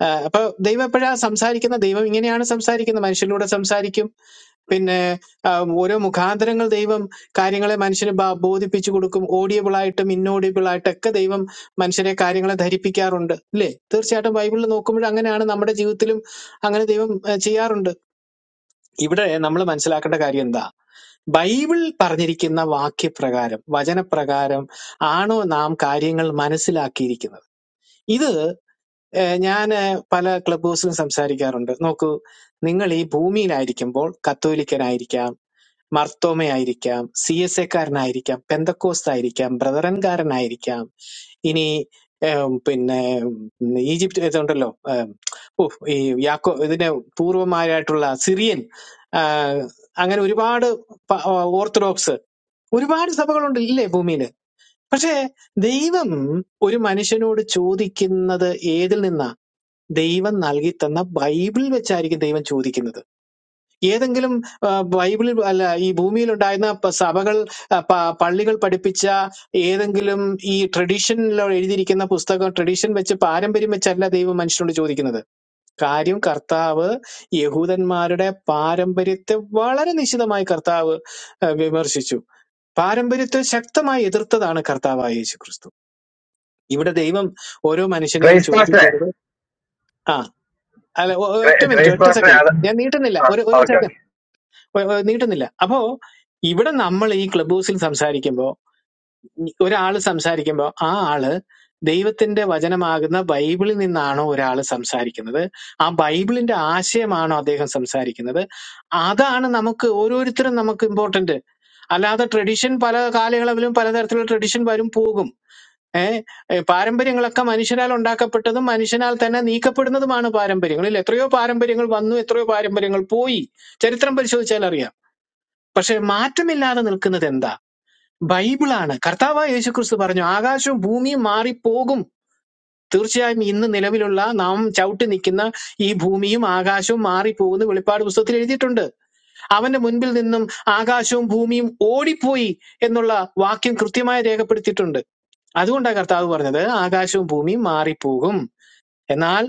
Speaker 6: ആ, അപ്പൊ ദൈവം എപ്പോഴാ സംസാരിക്കുന്ന ദൈവം ഇങ്ങനെയാണ് സംസാരിക്കുന്നത് മനുഷ്യരിലൂടെ സംസാരിക്കും പിന്നെ ആ, ഓരോ മുഖാന്തരങ്ങൾ ദൈവം കാര്യങ്ങളെ മനുഷ്യന് ബ- ബോധിപ്പിച്ചു കൊടുക്കും ഓഡിയബിൾ ആയിട്ടും ഇന്നോഡിയബിൾ ആയിട്ടും ഒക്കെ ദൈവം മനുഷ്യരെ കാര്യങ്ങളെ ധരിപ്പിക്കാറുണ്ട് അല്ലേ തീർച്ചയായിട്ടും ബൈബിളിൽ നോക്കുമ്പോൾ അങ്ങനെയാണ് നമ്മുടെ ജീവിതത്തിലും അങ്ങനെ ദൈവം ഏഹ്, ചെയ്യാറുണ്ട് ഇവിടെ നമ്മൾ മനസ്സിലാക്കേണ്ട കാര്യം എന്താ ബൈബിൾ പറഞ്ഞിരിക്കുന്ന വാക്യപ്രകാരം വചനപ്രകാരം ആണോ നാം കാര്യങ്ങൾ മനസ്സിലാക്കിയിരിക്കുന്നത് ഇത് ഏഹ്, ഞാൻ ഏഹ്, പല ക്ലബ് ഹൗസിലും സംസാരിക്കാറുണ്ട് നോക്കൂ നിങ്ങൾ ഈ ഭൂമിയിലായിരിക്കുമ്പോൾ കത്തോലിക്കനായിരിക്കാം മർത്തോമയായിരിക്കാം സി എസ് എക്കാരനായിരിക്കാം പെന്തക്കോസ്തായിരിക്കാം ബ്രദറൻകാരനായിരിക്കാം ഇനി ഏം, പിന്നെ ഉം, ഈജിപ്ത് ഇതുണ്ടല്ലോ ഏം, ഉഫ്, ഈ യാക്കോ ഇതിന്റെ പൂർവമായിട്ടുള്ള സിറിയൻ ആ, അങ്ങനെ ഒരുപാട് പ- ഓർത്തഡോക്സ് ഒരുപാട് സഭകളുണ്ട് ഇല്ലേ ഭൂമിയിൽ പക്ഷേ ദൈവം ഒരു മനുഷ്യനോട് ചോദിക്കുന്നത് ഏതിൽ നിന്നാ ദൈവം നൽകി തന്ന ബൈബിൾ വെച്ചായിരിക്കും ദൈവം ചോദിക്കുന്നത് ഏതെങ്കിലും ആ, ബൈബിളിൽ അല്ല ഈ ഭൂമിയിൽ ഉണ്ടായിരുന്ന പ- സഭകൾ ആ, പ- പള്ളികൾ പഠിപ്പിച്ച ഏതെങ്കിലും ഈ ട്രഡീഷനിൽ എഴുതിയിരിക്കുന്ന പുസ്തകം ട്രഡീഷൻ വെച്ച് പാരമ്പര്യം വെച്ചല്ല ദൈവം മനുഷ്യനോട് ചോദിക്കുന്നത് കാര്യം കർത്താവ് യഹൂദന്മാരുടെ പാരമ്പര്യത്തെ വളരെ നിശിതമായി കർത്താവ് ആ, വിമർശിച്ചു പാരമ്പര്യത്തെ ശക്തമായി എതിർത്തതാണ് കർത്താവായ യേശു ക്രിസ്തു ഇവിടെ ദൈവം ഓരോ മനുഷ്യനെയും
Speaker 8: ക്രൈസ്റ്റ്
Speaker 6: ചോദ്യം
Speaker 8: പാസ്റ്ററെ
Speaker 6: ചെയ്തത് ആ അല്ല ഒ- ഒ- ഒറ്റ
Speaker 8: ക്രൈ-
Speaker 6: മിനിറ്റ്
Speaker 8: ക്രൈസ്റ്റ്
Speaker 6: ഒറ്റ
Speaker 8: പാസ്റ്ററെ
Speaker 6: സെക്കൻഡ്
Speaker 8: അത്
Speaker 6: ഞാൻ നീട്ടുന്നില്ല
Speaker 8: ആ
Speaker 6: ഒരു ഒരു
Speaker 8: ഓക്കെ
Speaker 6: സെക്കൻഡ്
Speaker 8: ഓക്കെ
Speaker 6: ഏ, ഏ, നീട്ടുന്നില്ല അപ്പോ ഇവിടെ നമ്മൾ ഈ ക്ലബ് ഹൗസിൽ സംസാരിക്കുമ്പോൾ ഒരാൾ സംസാരിക്കുമ്പോൾ ആ ആള് ദൈവത്തിന്റെ വചനമാകുന്ന ബൈബിളിൽ നിന്നാണോ ഒരാൾ സംസാരിക്കുന്നത് ആ ബൈബിളിന്റെ ആശയമാണോ അദ്ദേഹം സംസാരിക്കുന്നത് അതാണ് നമുക്ക് ഓരോരുത്തരും നമുക്ക് ഇമ്പോർട്ടന്റ് അല്ലാതെ ട്രഡീഷൻ പല കാലയളവിലും പലതരത്തിലുള്ള ട്രഡീഷൻ വരും പോകും ഏഹ് പാരമ്പര്യങ്ങളൊക്കെ മനുഷ്യനാൽ ഉണ്ടാക്കപ്പെട്ടതും മനുഷ്യനാൽ തന്നെ നീക്കപ്പെടുന്നതുമാണ് പാരമ്പര്യങ്ങളിൽ എത്രയോ പാരമ്പര്യങ്ങൾ വന്നു എത്രയോ പാരമ്പര്യങ്ങൾ പോയി ചരിത്രം പരിശോധിച്ചാൽ അറിയാം പക്ഷെ മാറ്റമില്ലാതെ നിൽക്കുന്നത് എന്താ ബൈബിളാണ് കർത്താവായ യേശുക്രിസ്തു പറഞ്ഞു ആകാശവും ഭൂമിയും മാറിപ്പോകും തീർച്ചയായും ഇന്ന് നിലവിലുള്ള നാം ചവിട്ടി നിൽക്കുന്ന ഈ ഭൂമിയും ആകാശവും മാറിപ്പോകുന്ന വെളിപ്പാട് പുസ്തകത്തിൽ എഴുതിയിട്ടുണ്ട് അവന്റെ മുൻപിൽ നിന്നും ആകാശവും ഭൂമിയും ഓടിപ്പോയി എന്നുള്ള വാക്യം കൃത്യമായി രേഖപ്പെടുത്തിയിട്ടുണ്ട് അതുകൊണ്ടാണ് കർത്താവ് പറഞ്ഞത് ആകാശവും ഭൂമിയും മാറിപ്പോകും എന്നാൽ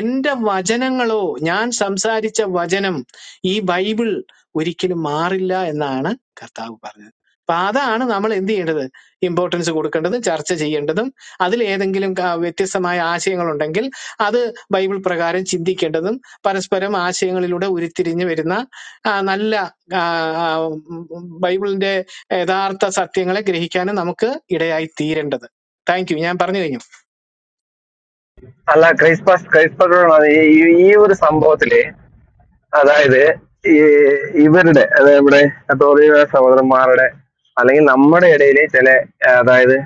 Speaker 6: എന്റെ വചനങ്ങളോ ഞാൻ സംസാരിച്ച വചനം ഈ ബൈബിൾ ഒരിക്കലും മാറില്ല എന്നാണ് കർത്താവ് പറഞ്ഞത് അപ്പൊ അതാണ് നമ്മൾ എന്ത് ചെയ്യേണ്ടത് ഇമ്പോർട്ടൻസ് കൊടുക്കേണ്ടതും ചർച്ച ചെയ്യേണ്ടതും അതിൽ ഏതെങ്കിലും ക- വ്യത്യസ്തമായ ആശയങ്ങളുണ്ടെങ്കിൽ അത് ബൈബിൾ പ്രകാരം ചിന്തിക്കേണ്ടതും പരസ്പരം ആശയങ്ങളിലൂടെ ഉരുത്തിരിഞ്ഞു വരുന്ന ആ, നല്ല ആ, ആ, ഉം, ബൈബിളിന്റെ യഥാർത്ഥ സത്യങ്ങളെ ഗ്രഹിക്കാനും നമുക്ക് ഇടയായി തീരേണ്ടത് താങ്ക് യു ഞാൻ പറഞ്ഞു കഴിഞ്ഞു
Speaker 8: അല്ല ക്രൈസ്റ്റ് പാസ്റ്റ് ക്രൈസ്റ്റ് പാസ്റ്ററോടാണ് ഈ ഈ- ഈ ഒരു സംഭവത്തില് അതായത് ഈ ഇവരുടെ അതായത് ഇവിടെ കത്തോലിക സഹോദരന്മാരുടെ അല്ലെങ്കിൽ നമ്മുടെ ഇടയിലെ ചില ആ, അതായത്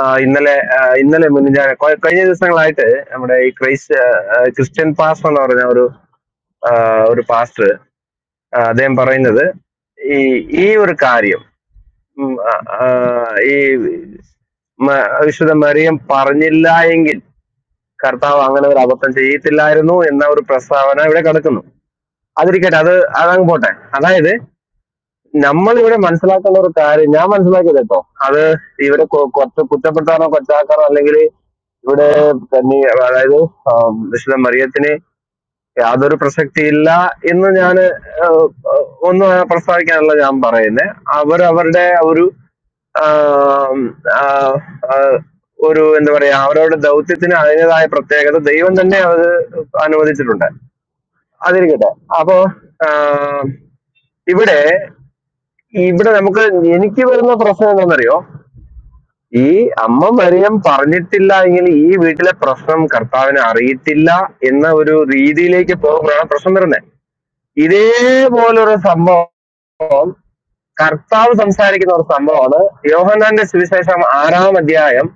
Speaker 8: ആ, ഇന്നലെ ആ, ഇന്നലെ മുന്നിഞ്ഞ കഴിഞ്ഞ ദിവസങ്ങളായിട്ട് നമ്മുടെ ഈ ക്രൈസ്റ്റ് ആ, ആ, ക്രിസ്ത്യൻ പാസ്റ്റർ എന്ന് പറഞ്ഞ ഒരു ആ, ഒരു പാസ്റ്റർ ആ, അദ്ദേഹം പറയുന്നത് ഈ ഈ ഒരു കാര്യം ഉം, ആ, ആ, ഈ മ- വിശുദ്ധ മറിയം പറഞ്ഞില്ല എങ്കിൽ കർത്താവ് അങ്ങനെ ഒരു അബദ്ധം ചെയ്യത്തില്ലായിരുന്നു എന്ന ഒരു പ്രസ്താവന ഇവിടെ കിടക്കുന്നു അതിരിക്കട്ടെ അത് അതങ്ങ് പോട്ടെ അതായത് നമ്മൾ ഇവിടെ മനസ്സിലാക്കേണ്ട ഒരു കാര്യം ഞാൻ മനസ്സിലാക്കിയത് കേട്ടോ അത് ഇവിടെ കൊ- കുറച്ച് കുറ്റപ്പെടുത്താനോ കൊച്ചാക്കാനോ അല്ലെങ്കിൽ ഇവിടെ തന്നെ അതായത് ആ, വിശുദ്ധ മറിയത്തിനെ യാതൊരു പ്രസക്തിയില്ല എന്ന് ഞാൻ ഒന്നും പ്രസ്താവിക്കാനല്ല ഞാൻ പറയുന്നത് അവരവരുടെ ഒരു ആം, ആ, ആ, ഒരു എന്താ പറയാ അവരവരുടെ ദൗത്യത്തിന് അതിൻ്റെതായ പ്രത്യേകത ദൈവം തന്നെ അത് അനുവദിച്ചിട്ടുണ്ട് അതിരിക്കട്ടെ അപ്പോ ആം, ഇവിടെ ഇവിടെ നമുക്ക് എനിക്ക് വരുന്ന പ്രശ്നം എന്താണെന്നറിയോ ഈ അമ്മ മറിയം പറഞ്ഞിട്ടില്ല എങ്കിൽ ഈ വീട്ടിലെ പ്രശ്നം കർത്താവിനെ അറിയിട്ടില്ല എന്ന ഒരു രീതിയിലേക്ക് പോകുമ്പോഴാണ് പ്രശ്നം വരുന്നത് ഇതേപോലൊരു സംഭവം കർത്താവ് സംസാരിക്കുന്ന ഒരു സംഭവമാണ് യോഹന്നാന്റെ സുവിശേഷം ആറാം അധ്യായം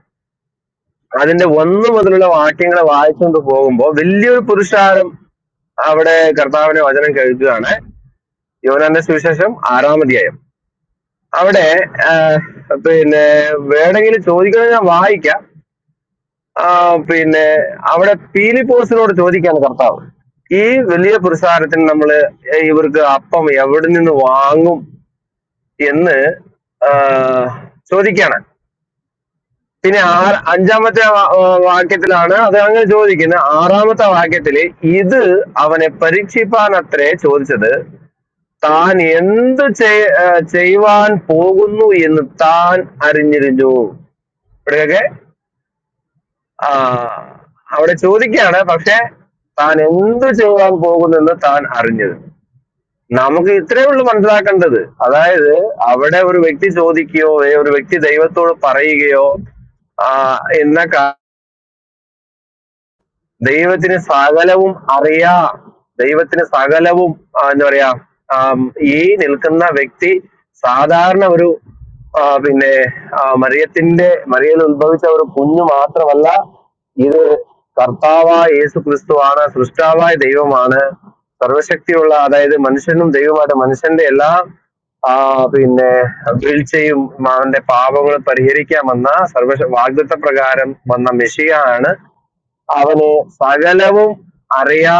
Speaker 8: അതിന്റെ ഒന്ന് മുതലുള്ള വാക്യങ്ങൾ വായിച്ചുകൊണ്ട് പോകുമ്പോൾ വലിയൊരു പുരുഷാരം അവിടെ കർത്താവിന്റെ വചനം കേൾക്കുകയാണ് യോഹന്നാന്റെ സുവിശേഷം ആറാം അധ്യായം അവിടെ ആ, പിന്നെ വേണമെങ്കിലും ചോദിക്കണമെങ്കിൽ ഞാൻ വായിക്കാം ആ, പിന്നെ അവിടെ പീലിപ്പോസിനോട് ചോദിക്കാണ് കർത്താവ് ഈ വലിയ പുരുഷാരത്തിന് നമ്മള് ഏ, ഇവർക്ക് അപ്പം എവിടെ നിന്ന് വാങ്ങും എന്ന് ആ, ചോദിക്കാണ് പിന്നെ ആ അഞ്ചാമത്തെ വാ- ആ, വാക്യത്തിലാണ് അത് അങ്ങനെ ചോദിക്കുന്നത് ആറാമത്തെ വാക്യത്തില് ഇത് അവനെ പരീക്ഷിപ്പാൻ അത്രേ ചോദിച്ചത് താൻ എന്ത് ചെയ്- ആ, ചെയ്യുവാൻ പോകുന്നു എന്ന് താൻ അറിഞ്ഞിരുന്നു ഇവിടെയൊക്കെ ആ, അവിടെ ചോദിക്കാണ് പക്ഷെ താൻ എന്ത് ചെയ്യുവാൻ പോകുന്നെന്ന് താൻ അറിഞ്ഞത് നമുക്ക് ഇത്രയേ ഉള്ളൂ മനസ്സിലാക്കേണ്ടത് അതായത് അവിടെ ഒരു വ്യക്തി ചോദിക്കുകയോ ഏ, ഒരു വ്യക്തി ദൈവത്തോട് പറയുകയോ ആ, എന്ന ദൈവത്തിന് സകലവും അറിയാ ദൈവത്തിന് സകലവും ആ, എന്താ പറയാ ആം, ഈ നിൽക്കുന്ന വ്യക്തി സാധാരണ ഒരു ആ, പിന്നെ ആ, മറിയത്തിന്റെ മറിയയിൽ ഉത്ഭവിച്ച ഒരു കുഞ്ഞു മാത്രമല്ല ഇത് കർത്താവായ യേസു ക്രിസ്തുവാണ് സൃഷ്ടാവായ ദൈവമാണ് സർവശക്തിയുള്ള അതായത് മനുഷ്യനും ദൈവമായിട്ട് മനുഷ്യന്റെ എല്ലാ ആ പിന്നെ വീഴ്ചയും അവന്റെ പാപങ്ങൾ പരിഹരിക്കാൻ വന്ന സർവ വാഗ്ദത്ത പ്രകാരം വന്ന മെഷിയാണ് അവന് സകലവും അറിയാ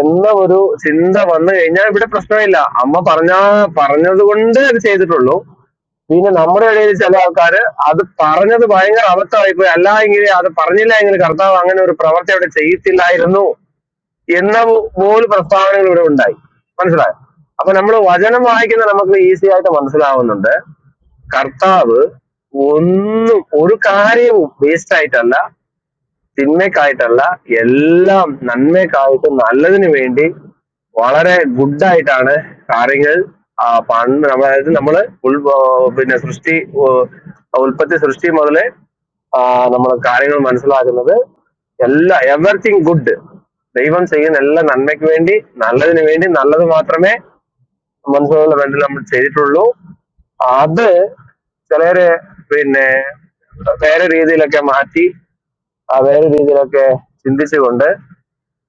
Speaker 8: എന്ന ഒരു ചിന്ത വന്നു കഴിഞ്ഞാൽ ഇവിടെ പ്രശ്നമില്ല അമ്മ പറഞ്ഞ പറഞ്ഞത് കൊണ്ട് അത് ചെയ്തിട്ടുള്ളൂ പിന്നെ നമ്മുടെ ഇടയിൽ ചില ആൾക്കാര് അത് പറഞ്ഞത് ഭയങ്കര അബദ്ധമായി പോയി അല്ല എങ്കിൽ അത് പറഞ്ഞില്ല എങ്കിൽ കർത്താവ് അങ്ങനെ ഒരു പ്രവർത്തി അവിടെ ചെയ്യത്തില്ലായിരുന്നു എന്ന പോ- പോലും പ്രസ്താവനകൾ ഇവിടെ ഉണ്ടായി മനസ്സിലായോ അപ്പൊ നമ്മൾ വചനം വായിക്കുന്ന നമുക്ക് ഈസി ആയിട്ട് മനസ്സിലാവുന്നുണ്ട് കർത്താവ് ഒന്നും ഒരു കാര്യവും വേസ്റ്റ് ആയിട്ടല്ല തിന്മയ്ക്കായിട്ടല്ല എല്ലാം നന്മയ്ക്കായിട്ട് നല്ലതിന് വേണ്ടി വളരെ ഗുഡായിട്ടാണ് കാര്യങ്ങൾ ആ, പണ്ട് നമ്മ- അതായത് നമ്മള് ഉൾ ആ, പിന്നെ സൃഷ്ടി ഓ, ഉൽപ്പത്തി സൃഷ്ടി മുതലേ നമ്മൾ കാര്യങ്ങൾ മനസ്സിലാക്കുന്നത് എല്ലാ എവറിത്തിങ് ഗുഡ് ദൈവം ചെയ്യുന്ന എല്ലാ നന്മയ്ക്ക് വേണ്ടി നല്ലതിന് വേണ്ടി നല്ലത് മാത്രമേ മനസ്സിലുള്ള ബന്ധം നമ്മൾ ചെയ്തിട്ടുള്ളൂ അത് ചിലര് പിന്നെ വേറെ രീതിയിലൊക്കെ മാറ്റി ആ വേറെ രീതിയിലൊക്കെ ചിന്തിച്ചുകൊണ്ട്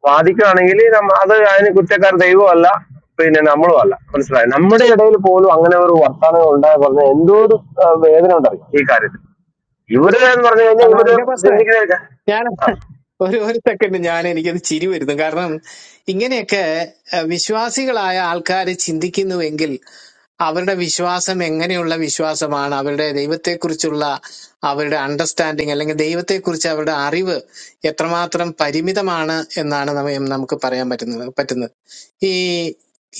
Speaker 8: വാദിക്കുകയാണെങ്കിൽ നമ്മ- അത് അതിന് കുറ്റക്കാരൻ ദൈവവും അല്ല പിന്നെ നമ്മളും അല്ല മനസ്സിലായി നമ്മുടെ ഇടയിൽ പോലും അങ്ങനെ ഒരു വർത്തമാനം ഉണ്ടായ പറഞ്ഞ എന്തോ ഒരു ആ, വേദന ഉണ്ടറിയും ഈ കാര്യത്തിൽ ഇവര് എന്ന് പറഞ്ഞു കഴിഞ്ഞാൽ
Speaker 6: അല്ല,
Speaker 8: ഇവര്
Speaker 6: എന്റെ
Speaker 8: ചിന്തിക്കുന്ന
Speaker 6: ഞാൻ ഒരു ഒരു സെക്കൻഡ് ഞാൻ എനിക്കത് ചിരി വരുന്നു കാരണം ഇങ്ങനെയൊക്കെ അഹ്, വിശ്വാസികളായ ആൾക്കാർ ചിന്തിക്കുന്നുവെങ്കിൽ അവരുടെ വിശ്വാസം എങ്ങനെയുള്ള വിശ്വാസമാണ് അവരുടെ ദൈവത്തെക്കുറിച്ചുള്ള അവരുടെ അണ്ടർസ്റ്റാൻഡിങ് അല്ലെങ്കിൽ ദൈവത്തെക്കുറിച്ച് അവരുടെ അറിവ് എത്രമാത്രം പരിമിതമാണ് എന്നാണ് നമ്മ- നമുക്ക് പറയാൻ പറ്റുന്നത് പറ്റുന്നത് ഈ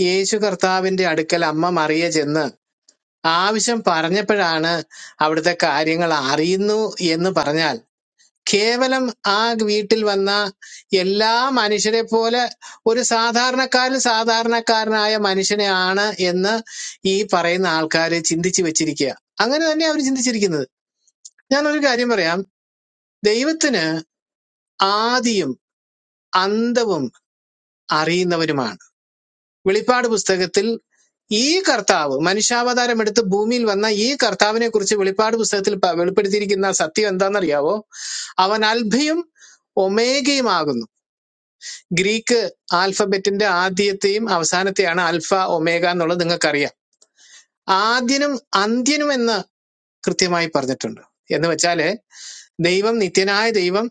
Speaker 6: യേശു കർത്താവിന്റെ അടുക്കൽ അമ്മ മറിയ ചെന്ന് ആവശ്യം പറഞ്ഞപ്പോഴാണ് അവിടുത്തെ കാര്യങ്ങൾ അറിയുന്നു എന്ന് പറഞ്ഞാൽ കേവലം ആ വീട്ടിൽ വന്ന എല്ലാ മനുഷ്യരെ പോലെ ഒരു സാധാരണക്കാരിൽ സാധാരണക്കാരനായ മനുഷ്യനെയാണ് എന്ന് ഈ പറയുന്ന ആൾക്കാർ ചിന്തിച്ചു വെച്ചിരിക്കുക അങ്ങനെ തന്നെ അവർ ചിന്തിച്ചിരിക്കുന്നത് ഞാനൊരു കാര്യം പറയാം ദൈവത്തിന് ആദിയും അന്തവും അറിയുന്നവരുമാണ് വെളിപ്പാട് പുസ്തകത്തിൽ ഈ കർത്താവ് മനുഷ്യാവതാരം എടുത്ത് ഭൂമിയിൽ വന്ന ഈ കർത്താവിനെ കുറിച്ച് വെളിപ്പാട് പുസ്തകത്തിൽ പ- വെളിപ്പെടുത്തിയിരിക്കുന്ന സത്യം എന്താണെന്നറിയാവോ അവൻ അൽഭയും ഒമേഗയുമാകുന്നു ഗ്രീക്ക് ആൽഫബറ്റിന്റെ ആദ്യത്തെയും അവസാനത്തെയാണ് ആൽഫ ഒമേഗ എന്നുള്ളത് നിങ്ങൾക്കറിയാം ആദ്യനും അന്ത്യനും എന്ന് കൃത്യമായി പറഞ്ഞിട്ടുണ്ട് എന്ന് വെച്ചാല് ദൈവം നിത്യനായ ദൈവം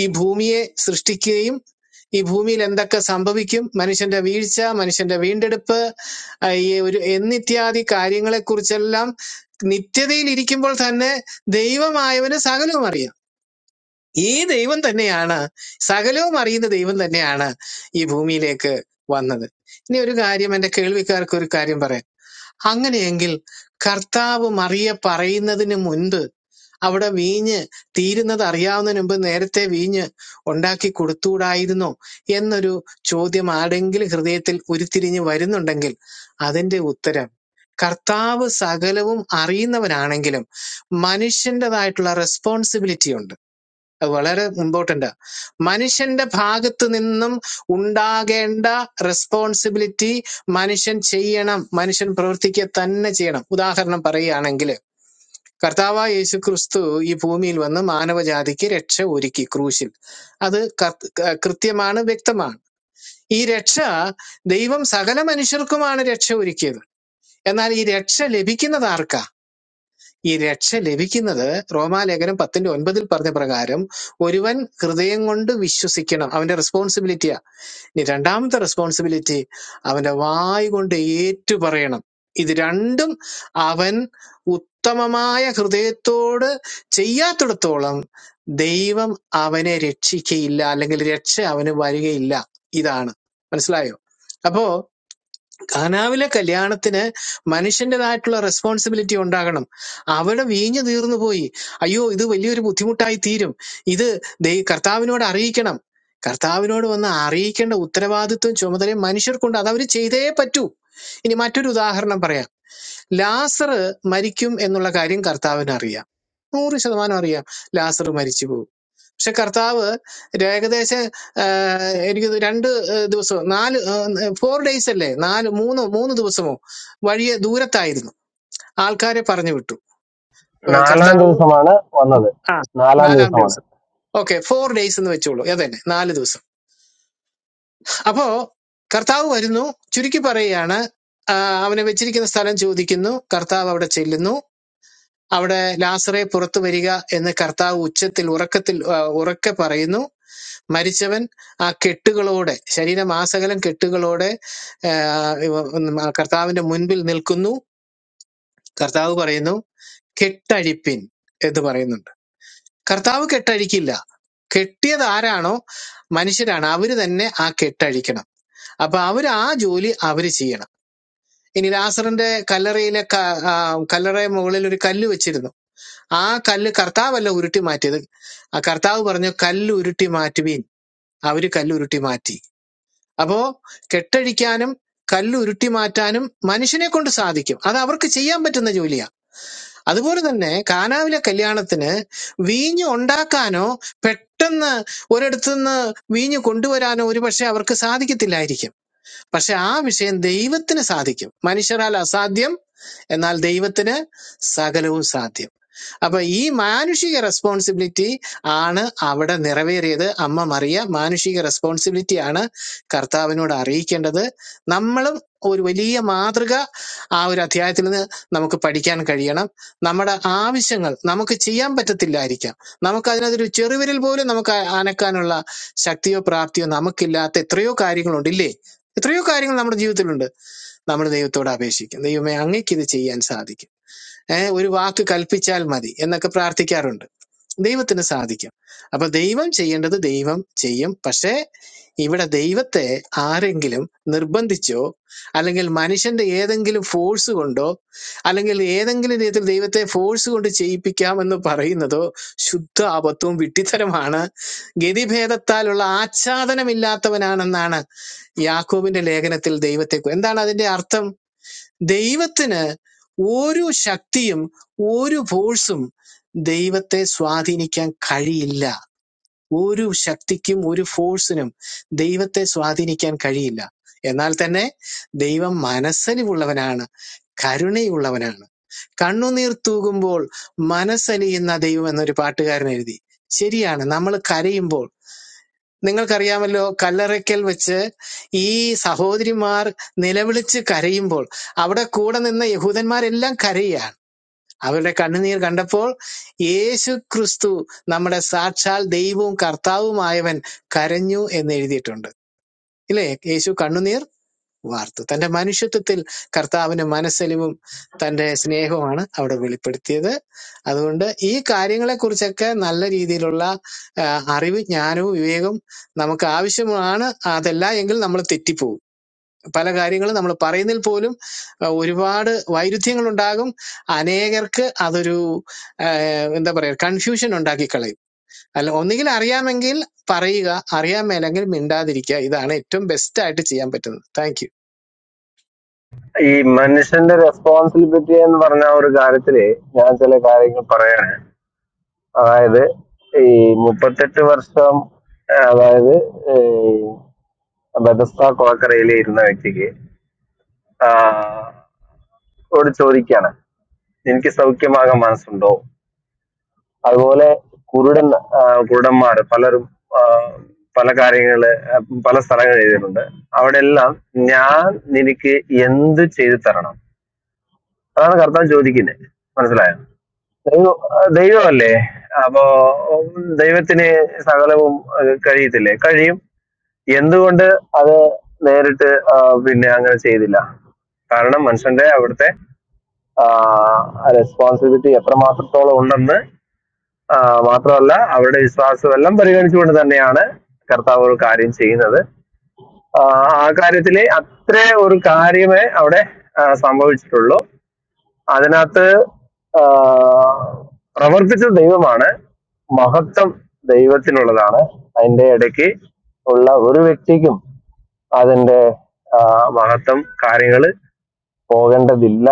Speaker 6: ഈ ഭൂമിയെ സൃഷ്ടിക്കുകയും ഈ ഭൂമിയിൽ എന്തൊക്കെ സംഭവിക്കും മനുഷ്യന്റെ വീഴ്ച മനുഷ്യന്റെ വീണ്ടെടുപ്പ് ആ, ഈ ഒരു എന്നിത്യാദി കാര്യങ്ങളെക്കുറിച്ചെല്ലാം നിത്യതയിൽ ഇരിക്കുമ്പോൾ തന്നെ ദൈവമായവന് സകലവും അറിയാം ഈ ദൈവം തന്നെയാണ് സകലവും അറിയുന്ന ദൈവം തന്നെയാണ് ഈ ഭൂമിയിലേക്ക് വന്നത് ഇനി ഒരു കാര്യം എന്റെ കേൾവിക്കാർക്ക് ഒരു കാര്യം പറയാം അങ്ങനെയെങ്കിൽ കർത്താവ് മറിയ പറയുന്നതിന് മുൻപ് അവിടെ വീഞ്ഞ് തീരുന്നത് അറിയാവുന്നതിന് മുമ്പ് നേരത്തെ വീഞ്ഞ് ഉണ്ടാക്കി കൊടുത്തുകൂടായിരുന്നോ എന്നൊരു ചോദ്യം ആരെങ്കിലും ഹൃദയത്തിൽ ഉരുത്തിരിഞ്ഞ് വരുന്നുണ്ടെങ്കിൽ അതിന്റെ ഉത്തരം കർത്താവ് സകലവും അറിയുന്നവനാണെങ്കിലും മനുഷ്യൻ്റെതായിട്ടുള്ള റെസ്പോൺസിബിലിറ്റി ഉണ്ട് അത് വളരെ ഇമ്പോർട്ടൻ്റാ മനുഷ്യന്റെ ഭാഗത്ത് നിന്നും ഉണ്ടാകേണ്ട റെസ്പോൺസിബിലിറ്റി മനുഷ്യൻ ചെയ്യണം മനുഷ്യൻ പ്രവർത്തിക്കുക തന്നെ ചെയ്യണം ഉദാഹരണം പറയുകയാണെങ്കിൽ കർത്താവായ യേശു ക്രിസ്തു ഈ ഭൂമിയിൽ വന്ന് മാനവജാതിക്ക് രക്ഷ ഒരുക്കി ക്രൂശിൽ അത് കർ- ക- കൃത്യമാണ് വ്യക്തമാണ് ഈ രക്ഷ ദൈവം സകല മനുഷ്യർക്കുമാണ് രക്ഷ ഒരുക്കിയത് എന്നാൽ ഈ രക്ഷ ലഭിക്കുന്നത് ആർക്കാ ഈ രക്ഷ ലഭിക്കുന്നത് റോമാലേഖനം പത്തിന്റെ ഒൻപതിൽ പറഞ്ഞ പ്രകാരം ഒരുവൻ ഹൃദയം കൊണ്ട് വിശ്വസിക്കണം അവന്റെ റെസ്പോൺസിബിലിറ്റിയാ ഇനി രണ്ടാമത്തെ റെസ്പോൺസിബിലിറ്റി അവന്റെ വായ് കൊണ്ട് ഏറ്റു പറയണം ഇത് രണ്ടും അവൻ ഉത്തമമായ ഹൃദയത്തോട് ചെയ്യാത്തിടത്തോളം ദൈവം അവനെ രക്ഷിക്കയില്ല അല്ലെങ്കിൽ രക്ഷ അവന് വരികയില്ല ഇതാണ് മനസ്സിലായോ അപ്പോ ഖനാവിലെ കല്യാണത്തിന് മനുഷ്യന്റേതായിട്ടുള്ള റെസ്പോൺസിബിലിറ്റി ഉണ്ടാകണം അവിടെ വീഞ്ഞു തീർന്നു പോയി അയ്യോ ഇത് വലിയൊരു ബുദ്ധിമുട്ടായി തീരും ഇത് ദൈ- കർത്താവിനോട് അറിയിക്കണം കർത്താവിനോട് വന്ന് അറിയിക്കേണ്ട ഉത്തരവാദിത്വം ചുമതലയും മനുഷ്യർക്കുണ്ട് അത് അവർ ചെയ്തേ പറ്റൂ ഇനി മറ്റൊരു ഉദാഹരണം പറയാം ലാസർ മരിക്കും എന്നുള്ള കാര്യം കർത്താവിന് അറിയാം നൂറ് ശതമാനം അറിയാം ലാസർ മരിച്ചു പോകും. പക്ഷെ കർത്താവ് ഏകദേശം ആഹ്, എനിക്ക് തോന്നുന്നു രണ്ട് ആഹ്, ദിവസം നാല് ഫോർ ഡേയ്സ് അല്ലേ നാല് മൂന്ന് മൂന്ന് ദിവസമോ വഴിയെ ദൂരത്തായിരുന്നു ആൾക്കാരെ പറഞ്ഞു വിട്ടു ഇപ്പൊ
Speaker 8: നാലാം
Speaker 6: കർത്താവ്
Speaker 8: ദിവസമാണ് വന്നത്
Speaker 6: ആ
Speaker 8: നാലാം
Speaker 6: നാലാം
Speaker 8: ദിവസമാണ്
Speaker 6: ദിവസം ഓക്കെ ഫോർ ഡേയ്സ് എന്ന് വെച്ചോളൂ അതന്നെ നാല് ദിവസം അപ്പോ കർത്താവ് വരുന്നു ചുരുക്കി പറയുകയാണ് ആഹ്, അവനെ വെച്ചിരിക്കുന്ന സ്ഥലം ചോദിക്കുന്നു കർത്താവ് അവിടെ ചെല്ലുന്നു അവിടെ ലാസറെ പുറത്തു വരിക എന്ന് കർത്താവ് ഉച്ചത്തിൽ ഉറക്കത്തിൽ ആഹ്, ഉറക്കെ പറയുന്നു മരിച്ചവൻ ആ കെട്ടുകളോടെ ശരീരം ആസകലം കെട്ടുകളോടെ ആ, ഇവ- ഉം, ആ കർത്താവിന്റെ മുൻപിൽ നിൽക്കുന്നു കർത്താവ് പറയുന്നു കെട്ടഴിപ്പിൻ എന്ന് പറയുന്നുണ്ട് കർത്താവ് കെട്ടഴിക്കില്ല കെട്ടിയത് ആരാണോ മനുഷ്യരാണ് അവര് തന്നെ ആ കെട്ടഴിക്കണം അപ്പൊ അവര് ആ ജോലി അവര് ചെയ്യണം ഇനി ലാസറിന്റെ കല്ലറയിലെ ക- ആ, കല്ലറയുടെ മുകളിൽ ഒരു കല്ല് വെച്ചിരുന്നു ആ കല്ല് കർത്താവല്ല ഉരുട്ടി മാറ്റിയത് ആ കർത്താവ് പറഞ്ഞു കല്ല് ഉരുട്ടി മാറ്റുവീൻ അവര് കല്ല് ഉരുട്ടി മാറ്റി അപ്പോ കെട്ടഴിക്കാനും കല്ല് ഉരുട്ടി മാറ്റാനും മനുഷ്യനെ കൊണ്ട് സാധിക്കും അത് അവർക്ക് ചെയ്യാൻ പറ്റുന്ന ജോലിയാ അതുപോലെ തന്നെ കാനാവിലെ കല്യാണത്തിന് വീഞ്ഞ് ഉണ്ടാക്കാനോ പെട്ടെന്ന് ഒരിടത്തു നിന്ന് വീഞ്ഞ് കൊണ്ടുവരാനോ ഒരുപക്ഷെ അവർക്ക് സാധിക്കത്തില്ലായിരിക്കും പക്ഷെ ആ വിഷയം ദൈവത്തിന് സാധിക്കും മനുഷ്യരാൽ അസാധ്യം എന്നാൽ ദൈവത്തിന് സകലവും സാധ്യം അപ്പൊ ഈ മാനുഷിക റെസ്പോൺസിബിലിറ്റി ആണ് അവിടെ നിറവേറിയത് അമ്മ മറിയ മാനുഷിക റെസ്പോൺസിബിലിറ്റി ആണ് കർത്താവിനോട് അറിയിക്കേണ്ടത് നമ്മളും ഒരു വലിയ മാതൃക ആ ഒരു അധ്യായത്തിൽ നിന്ന് നമുക്ക് പഠിക്കാൻ കഴിയണം നമ്മുടെ ആവശ്യങ്ങൾ നമുക്ക് ചെയ്യാൻ പറ്റത്തില്ലായിരിക്കാം നമുക്ക് അതിനകത്തൊരു ചെറുവിരൽ പോലും നമുക്ക് ആ- അനക്കാനുള്ള ശക്തിയോ പ്രാപ്തിയോ നമുക്കില്ലാത്ത എത്രയോ കാര്യങ്ങളുണ്ട് ഇല്ലേ എത്രയോ കാര്യങ്ങൾ നമ്മുടെ ജീവിതത്തിലുണ്ട് നമ്മൾ ദൈവത്തോട് അപേക്ഷിക്കും ദൈവമേ അങ്ങയ്ക്ക് ഇത് ചെയ്യാൻ സാധിക്കും ഏഹ് ഒരു വാക്ക് കൽപ്പിച്ചാൽ മതി എന്നൊക്കെ പ്രാർത്ഥിക്കാറുണ്ട് ദൈവത്തിന് സാധിക്കും അപ്പൊ ദൈവം ചെയ്യേണ്ടത് ദൈവം ചെയ്യും പക്ഷേ ഇവിടെ ദൈവത്തെ ആരെങ്കിലും നിർബന്ധിച്ചോ അല്ലെങ്കിൽ മനുഷ്യന്റെ ഏതെങ്കിലും ഫോഴ്സ് കൊണ്ടോ അല്ലെങ്കിൽ ഏതെങ്കിലും രീതിയിൽ ദൈവത്തെ ഫോഴ്സ് കൊണ്ട് ചെയ്യിപ്പിക്കാമെന്ന് പറയുന്നതോ ശുദ്ധ അബദ്ധവും വിട്ടിത്തരമാണ് ഗതിഭേദത്താലുള്ള ആച്ഛാദനമില്ലാത്തവനാണെന്നാണ് യാക്കോബിന്റെ ലേഖനത്തിൽ ദൈവത്തെ എന്താണ് അതിന്റെ അർത്ഥം ദൈവത്തിന് ഒരു ശക്തിയും ഒരു ഫോഴ്സും ദൈവത്തെ സ്വാധീനിക്കാൻ കഴിയില്ല ഒരു ശക്തിക്കും ഒരു ഫോഴ്സിനും ദൈവത്തെ സ്വാധീനിക്കാൻ കഴിയില്ല എന്നാൽ തന്നെ ദൈവം മനസ്സലിവുള്ളവനാണ് കരുണയുള്ളവനാണ് കണ്ണുനീർ തൂകുമ്പോൾ മനസ്സലിയുന്ന ദൈവം എന്നൊരു പാട്ടുകാരൻ എഴുതി ശരിയാണ് നമ്മൾ കരയുമ്പോൾ നിങ്ങൾക്കറിയാമല്ലോ കല്ലറയ്ക്കൽ വെച്ച് ഈ സഹോദരിമാർ നിലവിളിച്ച് കരയുമ്പോൾ അവിടെ കൂടെ നിന്ന യഹൂദന്മാരെല്ലാം കരയുകയാണ് അവരുടെ കണ്ണുനീർ കണ്ടപ്പോൾ യേശു ക്രിസ്തു നമ്മുടെ സാക്ഷാൽ ദൈവവും കർത്താവുമായവൻ കരഞ്ഞു എന്ന് എഴുതിയിട്ടുണ്ട് ഇല്ലേ യേശു കണ്ണുനീർ വാർത്തു തന്റെ മനുഷ്യത്വത്തിൽ കർത്താവിന് മനസ്സലിവും തന്റെ സ്നേഹവുമാണ് അവിടെ വെളിപ്പെടുത്തിയത് അതുകൊണ്ട് ഈ കാര്യങ്ങളെക്കുറിച്ചൊക്കെ നല്ല രീതിയിലുള്ള ആ, അറിവ് ജ്ഞാനവും വിവേകവും നമുക്ക് ആവശ്യമാണ് അതല്ല എങ്കിൽ നമ്മൾ തെറ്റിപ്പോവും പല കാര്യങ്ങളും നമ്മൾ പറയുന്നതിൽ പോലും ആ, ഒരുപാട് വൈരുദ്ധ്യങ്ങൾ ഉണ്ടാകും അനേകർക്ക് അതൊരു ആ, എന്താ പറയുക കൺഫ്യൂഷൻ ഉണ്ടാക്കി കളയും അല്ല ഒന്നുകിൽ അറിയാമെങ്കിൽ പറയുക അറിയാൻ മേലെങ്കിൽ മിണ്ടാതിരിക്കുക ഇതാണ് ഏറ്റവും ബെസ്റ്റ് ആയിട്ട് ചെയ്യാൻ പറ്റുന്നത് താങ്ക് യു.
Speaker 8: ഈ മനുഷ്യന്റെ റെസ്പോൺസിബിലിറ്റി എന്ന് പറഞ്ഞ ഒരു കാര്യത്തില് ഞാൻ ചില കാര്യങ്ങൾ പറയാണ് അതായത് ഈ മുപ്പത്തെട്ട് വർഷം ആ, അതായത് ഈ ബെതസ്ത കുളക്കരയിൽ ഇരുന്ന വ്യക്തിക്ക് ആ, ഓട് ചോദിക്കാണ് എനിക്ക് സൗഖ്യമാകാൻ മനസ്സുണ്ടോ അതുപോലെ കുരുടൻ ആ, കുരുടന്മാർ പലരും ആ, പല കാര്യങ്ങള് ആ, പല സ്ഥലങ്ങൾ എഴുതിയിട്ടുണ്ട് അവിടെ എല്ലാം ഞാൻ നിനക്ക് എന്ത് ചെയ്തു തരണം അതാണ് കർത്താൻ ചോദിക്കുന്നത് മനസ്സിലായോ ദൈവം ദൈവമല്ലേ അപ്പോ ദൈവത്തിന് സകലവും ഏഹ്, കഴിയത്തില്ലേ കഴിയും എന്തുകൊണ്ട് അത് നേരിട്ട് ആ, പിന്നെ അങ്ങനെ ചെയ്തില്ല കാരണം മനുഷ്യന്റെ അവിടുത്തെ റെസ്പോൺസിബിലിറ്റി എത്രമാത്രത്തോളം ഉണ്ടെന്ന് ആ, മാത്രമല്ല അവരുടെ വിശ്വാസമെല്ലാം പരിഗണിച്ചുകൊണ്ട് തന്നെയാണ് കർത്താവ് ഒരു കാര്യം ചെയ്യുന്നത് ആ ആ കാര്യത്തിലെ അത്ര ഒരു കാര്യമേ അവിടെ ആ, സംഭവിച്ചിട്ടുള്ളൂ അതിനകത്ത് ആ, പ്രവർത്തിച്ച ദൈവമാണ് മഹത്വം ദൈവത്തിനുള്ളതാണ് അതിന്റെ ഇടയ്ക്ക് ഉള്ള ഒരു വ്യക്തിക്കും അതിന്റെ ആ, മഹത്വം കാര്യങ്ങൾ പോകേണ്ടതില്ല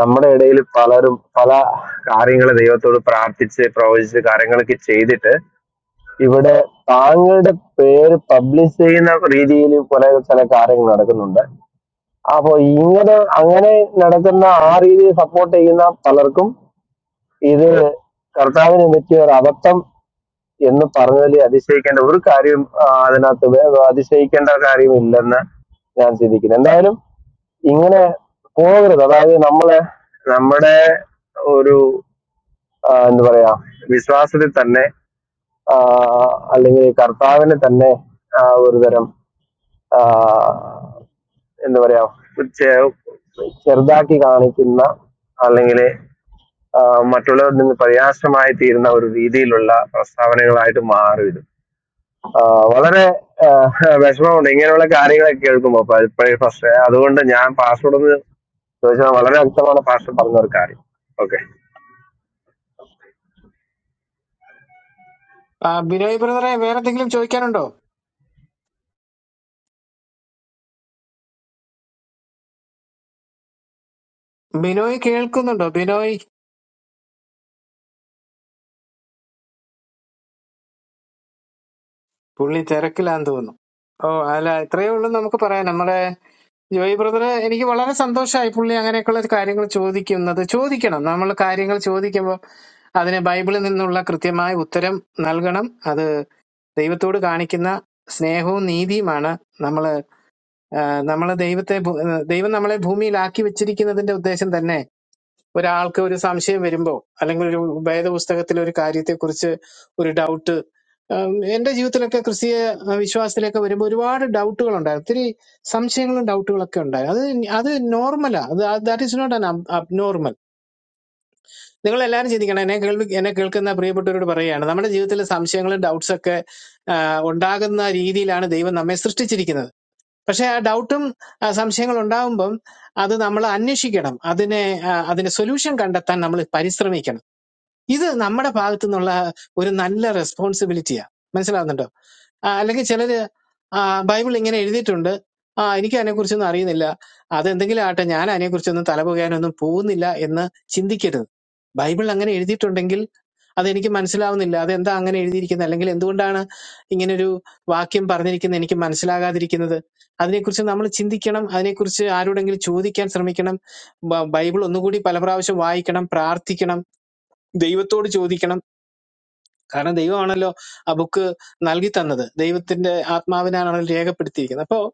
Speaker 8: നമ്മുടെ ഇടയിൽ പലരും പല കാര്യങ്ങൾ ദൈവത്തോട് പ്രാർത്ഥിച്ച് പ്രവചിച്ച് കാര്യങ്ങളൊക്കെ ചെയ്തിട്ട് ഇവിടെ താങ്കളുടെ പേര് പബ്ലിഷ് ചെയ്യുന്ന രീതിയിൽ കുറെ ചില കാര്യങ്ങൾ നടക്കുന്നുണ്ട് അപ്പൊ ഇങ്ങനെ അങ്ങനെ നടക്കുന്ന ആ രീതിയിൽ സപ്പോർട്ട് ചെയ്യുന്ന പലർക്കും ഇത് കർത്താവിനെ പറ്റിയ ഒരു അബദ്ധം എന്ന് പറഞ്ഞതിൽ അതിശയിക്കേണ്ട ഒരു കാര്യം ആ, അതിനകത്ത് വേ- അതിശയിക്കേണ്ട കാര്യം ഇല്ലെന്ന് ഞാൻ ചിന്തിക്കുന്നു എന്തായാലും ഇങ്ങനെ പോകരുത് അതായത് നമ്മളെ നമ്മുടെ ഒരു ആ, എന്താ പറയാ വിശ്വാസത്തിൽ തന്നെ ആ, അല്ലെങ്കിൽ കർത്താവിനെ തന്നെ ആ, ഒരു തരം ആ, എന്താ പറയാ ചെ- ചെറുതാക്കി കാണിക്കുന്ന അല്ലെങ്കിൽ ആ, മറ്റുള്ളവരിൽ നിന്ന് പര്യാസമായി തീരുന്ന ഒരു രീതിയിലുള്ള പ്രസ്താവനകളായിട്ട് മാറി ഇത് ആ, വളരെ ആ, വിഷമമുണ്ട് ഇങ്ങനെയുള്ള കാര്യങ്ങളൊക്കെ കേൾക്കുമ്പോൾ ഇപ്പോഴേ ഫസ്റ്റ് അതുകൊണ്ട് ഞാൻ പാസ്വേഡ് ഒന്ന് ചോദിച്ചാൽ വളരെ വ്യക്തമാണ് പാസ്റ്റർ പറഞ്ഞ ഒരു കാര്യം ഓക്കെ
Speaker 6: ആ ബിനോയ് ബ്രദറെ വേറെ എന്തെങ്കിലും ചോദിക്കാനുണ്ടോ ബിനോയ് കേൾക്കുന്നുണ്ടോ ബിനോയ് പുള്ളി തിരക്കിലാന്ന് തോന്നുന്നു ഓ അല്ല ഇത്രയേ ഉള്ളൂ നമുക്ക് പറയാം നമ്മുടെ ജോയ് ബ്രദർ എനിക്ക് വളരെ സന്തോഷമായി പുള്ളി അങ്ങനെയൊക്കെയുള്ള കാര്യങ്ങൾ ചോദിക്കുന്നത് ചോദിക്കണം നമ്മൾ കാര്യങ്ങൾ ചോദിക്കുമ്പോൾ അതിന് ബൈബിളിൽ നിന്നുള്ള കൃത്യമായ ഉത്തരം നൽകണം അത് ദൈവത്തോട് കാണിക്കുന്ന സ്നേഹവും നീതിയുമാണ് നമ്മൾ നമ്മൾ ദൈവത്തെ ഭൂ- ദൈവം നമ്മളെ ഭൂമിയിലാക്കി വെച്ചിരിക്കുന്നതിന്റെ ഉദ്ദേശം തന്നെ ഒരാൾക്ക് ഒരു സംശയം വരുമ്പോൾ അല്ലെങ്കിൽ ഒരു വേദപുസ്തകത്തിലെ ഒരു കാര്യത്തെക്കുറിച്ച് ഒരു ഡൗട്ട് എന്റെ ജീവിതത്തിലൊക്കെ ക്രിസ്തീയ ആ, വിശ്വാസത്തിലൊക്കെ വരുമ്പോൾ ഒരുപാട് ഡൗട്ടുകൾ ഉണ്ടായിരുന്നു ഒത്തിരി സംശയങ്ങളും ഡൗട്ടുകളൊക്കെ ഉണ്ടായിരുന്നു അത് നി- അത് നോർമലാ അത് that is not an abnormal നിങ്ങൾ എല്ലാവരും ചിന്തിക്കണം എന്നെ കേൾവി എന്നെ കേൾക്കുന്ന പ്രിയപ്പെട്ടവരോട് പറയുകയാണ് നമ്മുടെ ജീവിതത്തിലെ സംശയങ്ങളും ഡൗട്ട്സ് ഒക്കെ ആ, ഉണ്ടാകുന്ന രീതിയിലാണ് ദൈവം നമ്മെ സൃഷ്ടിച്ചിരിക്കുന്നത് പക്ഷെ ആ ഡൗട്ടും സംശയങ്ങൾ ഉണ്ടാകുമ്പം അത് നമ്മൾ അന്വേഷിക്കണം അതിനെ ആ, അതിന് സൊല്യൂഷൻ കണ്ടെത്താൻ നമ്മൾ പരിശ്രമിക്കണം ഇത് നമ്മുടെ ഭാഗത്തു നിന്നുള്ള ഒരു നല്ല റെസ്പോൺസിബിലിറ്റിയാ മനസ്സിലാകുന്നുണ്ടോ ആ, അല്ലെങ്കിൽ ചിലര് ആ, ബൈബിൾ ഇങ്ങനെ എഴുതിയിട്ടുണ്ട് ആ എനിക്ക് അതിനെക്കുറിച്ചൊന്നും അറിയുന്നില്ല അതെന്തെങ്കിലും ആട്ടെ ഞാൻ അതിനെക്കുറിച്ചൊന്നും തലപുകയാനൊന്നും പോകുന്നില്ല എന്ന് ചിന്തിക്കരുത് ബൈബിൾ അങ്ങനെ എഴുതിയിട്ടുണ്ടെങ്കിൽ അതെനിക്ക് മനസ്സിലാവുന്നില്ല അതെന്താ അങ്ങനെ എഴുതിയിരിക്കുന്നത് അല്ലെങ്കിൽ എന്തുകൊണ്ടാണ് ഇങ്ങനൊരു വാക്യം പറഞ്ഞിരിക്കുന്നത് എനിക്ക് മനസ്സിലാകാതിരിക്കുന്നത് അതിനെക്കുറിച്ച് നമ്മൾ ചിന്തിക്കണം അതിനെക്കുറിച്ച് ആരോടെങ്കിലും ചോദിക്കാൻ ശ്രമിക്കണം ബ- ബൈബിൾ ഒന്നുകൂടി പല പ്രാവശ്യം വായിക്കണം പ്രാർത്ഥിക്കണം ദൈവത്തോട് ചോദിക്കണം കാരണം ദൈവമാണല്ലോ ആ ബുക്ക് നൽകി തന്നത് ദൈവത്തിന്റെ ആത്മാവിനാണല്ലോ രേഖപ്പെടുത്തിയിരിക്കുന്നത് അപ്പോൾ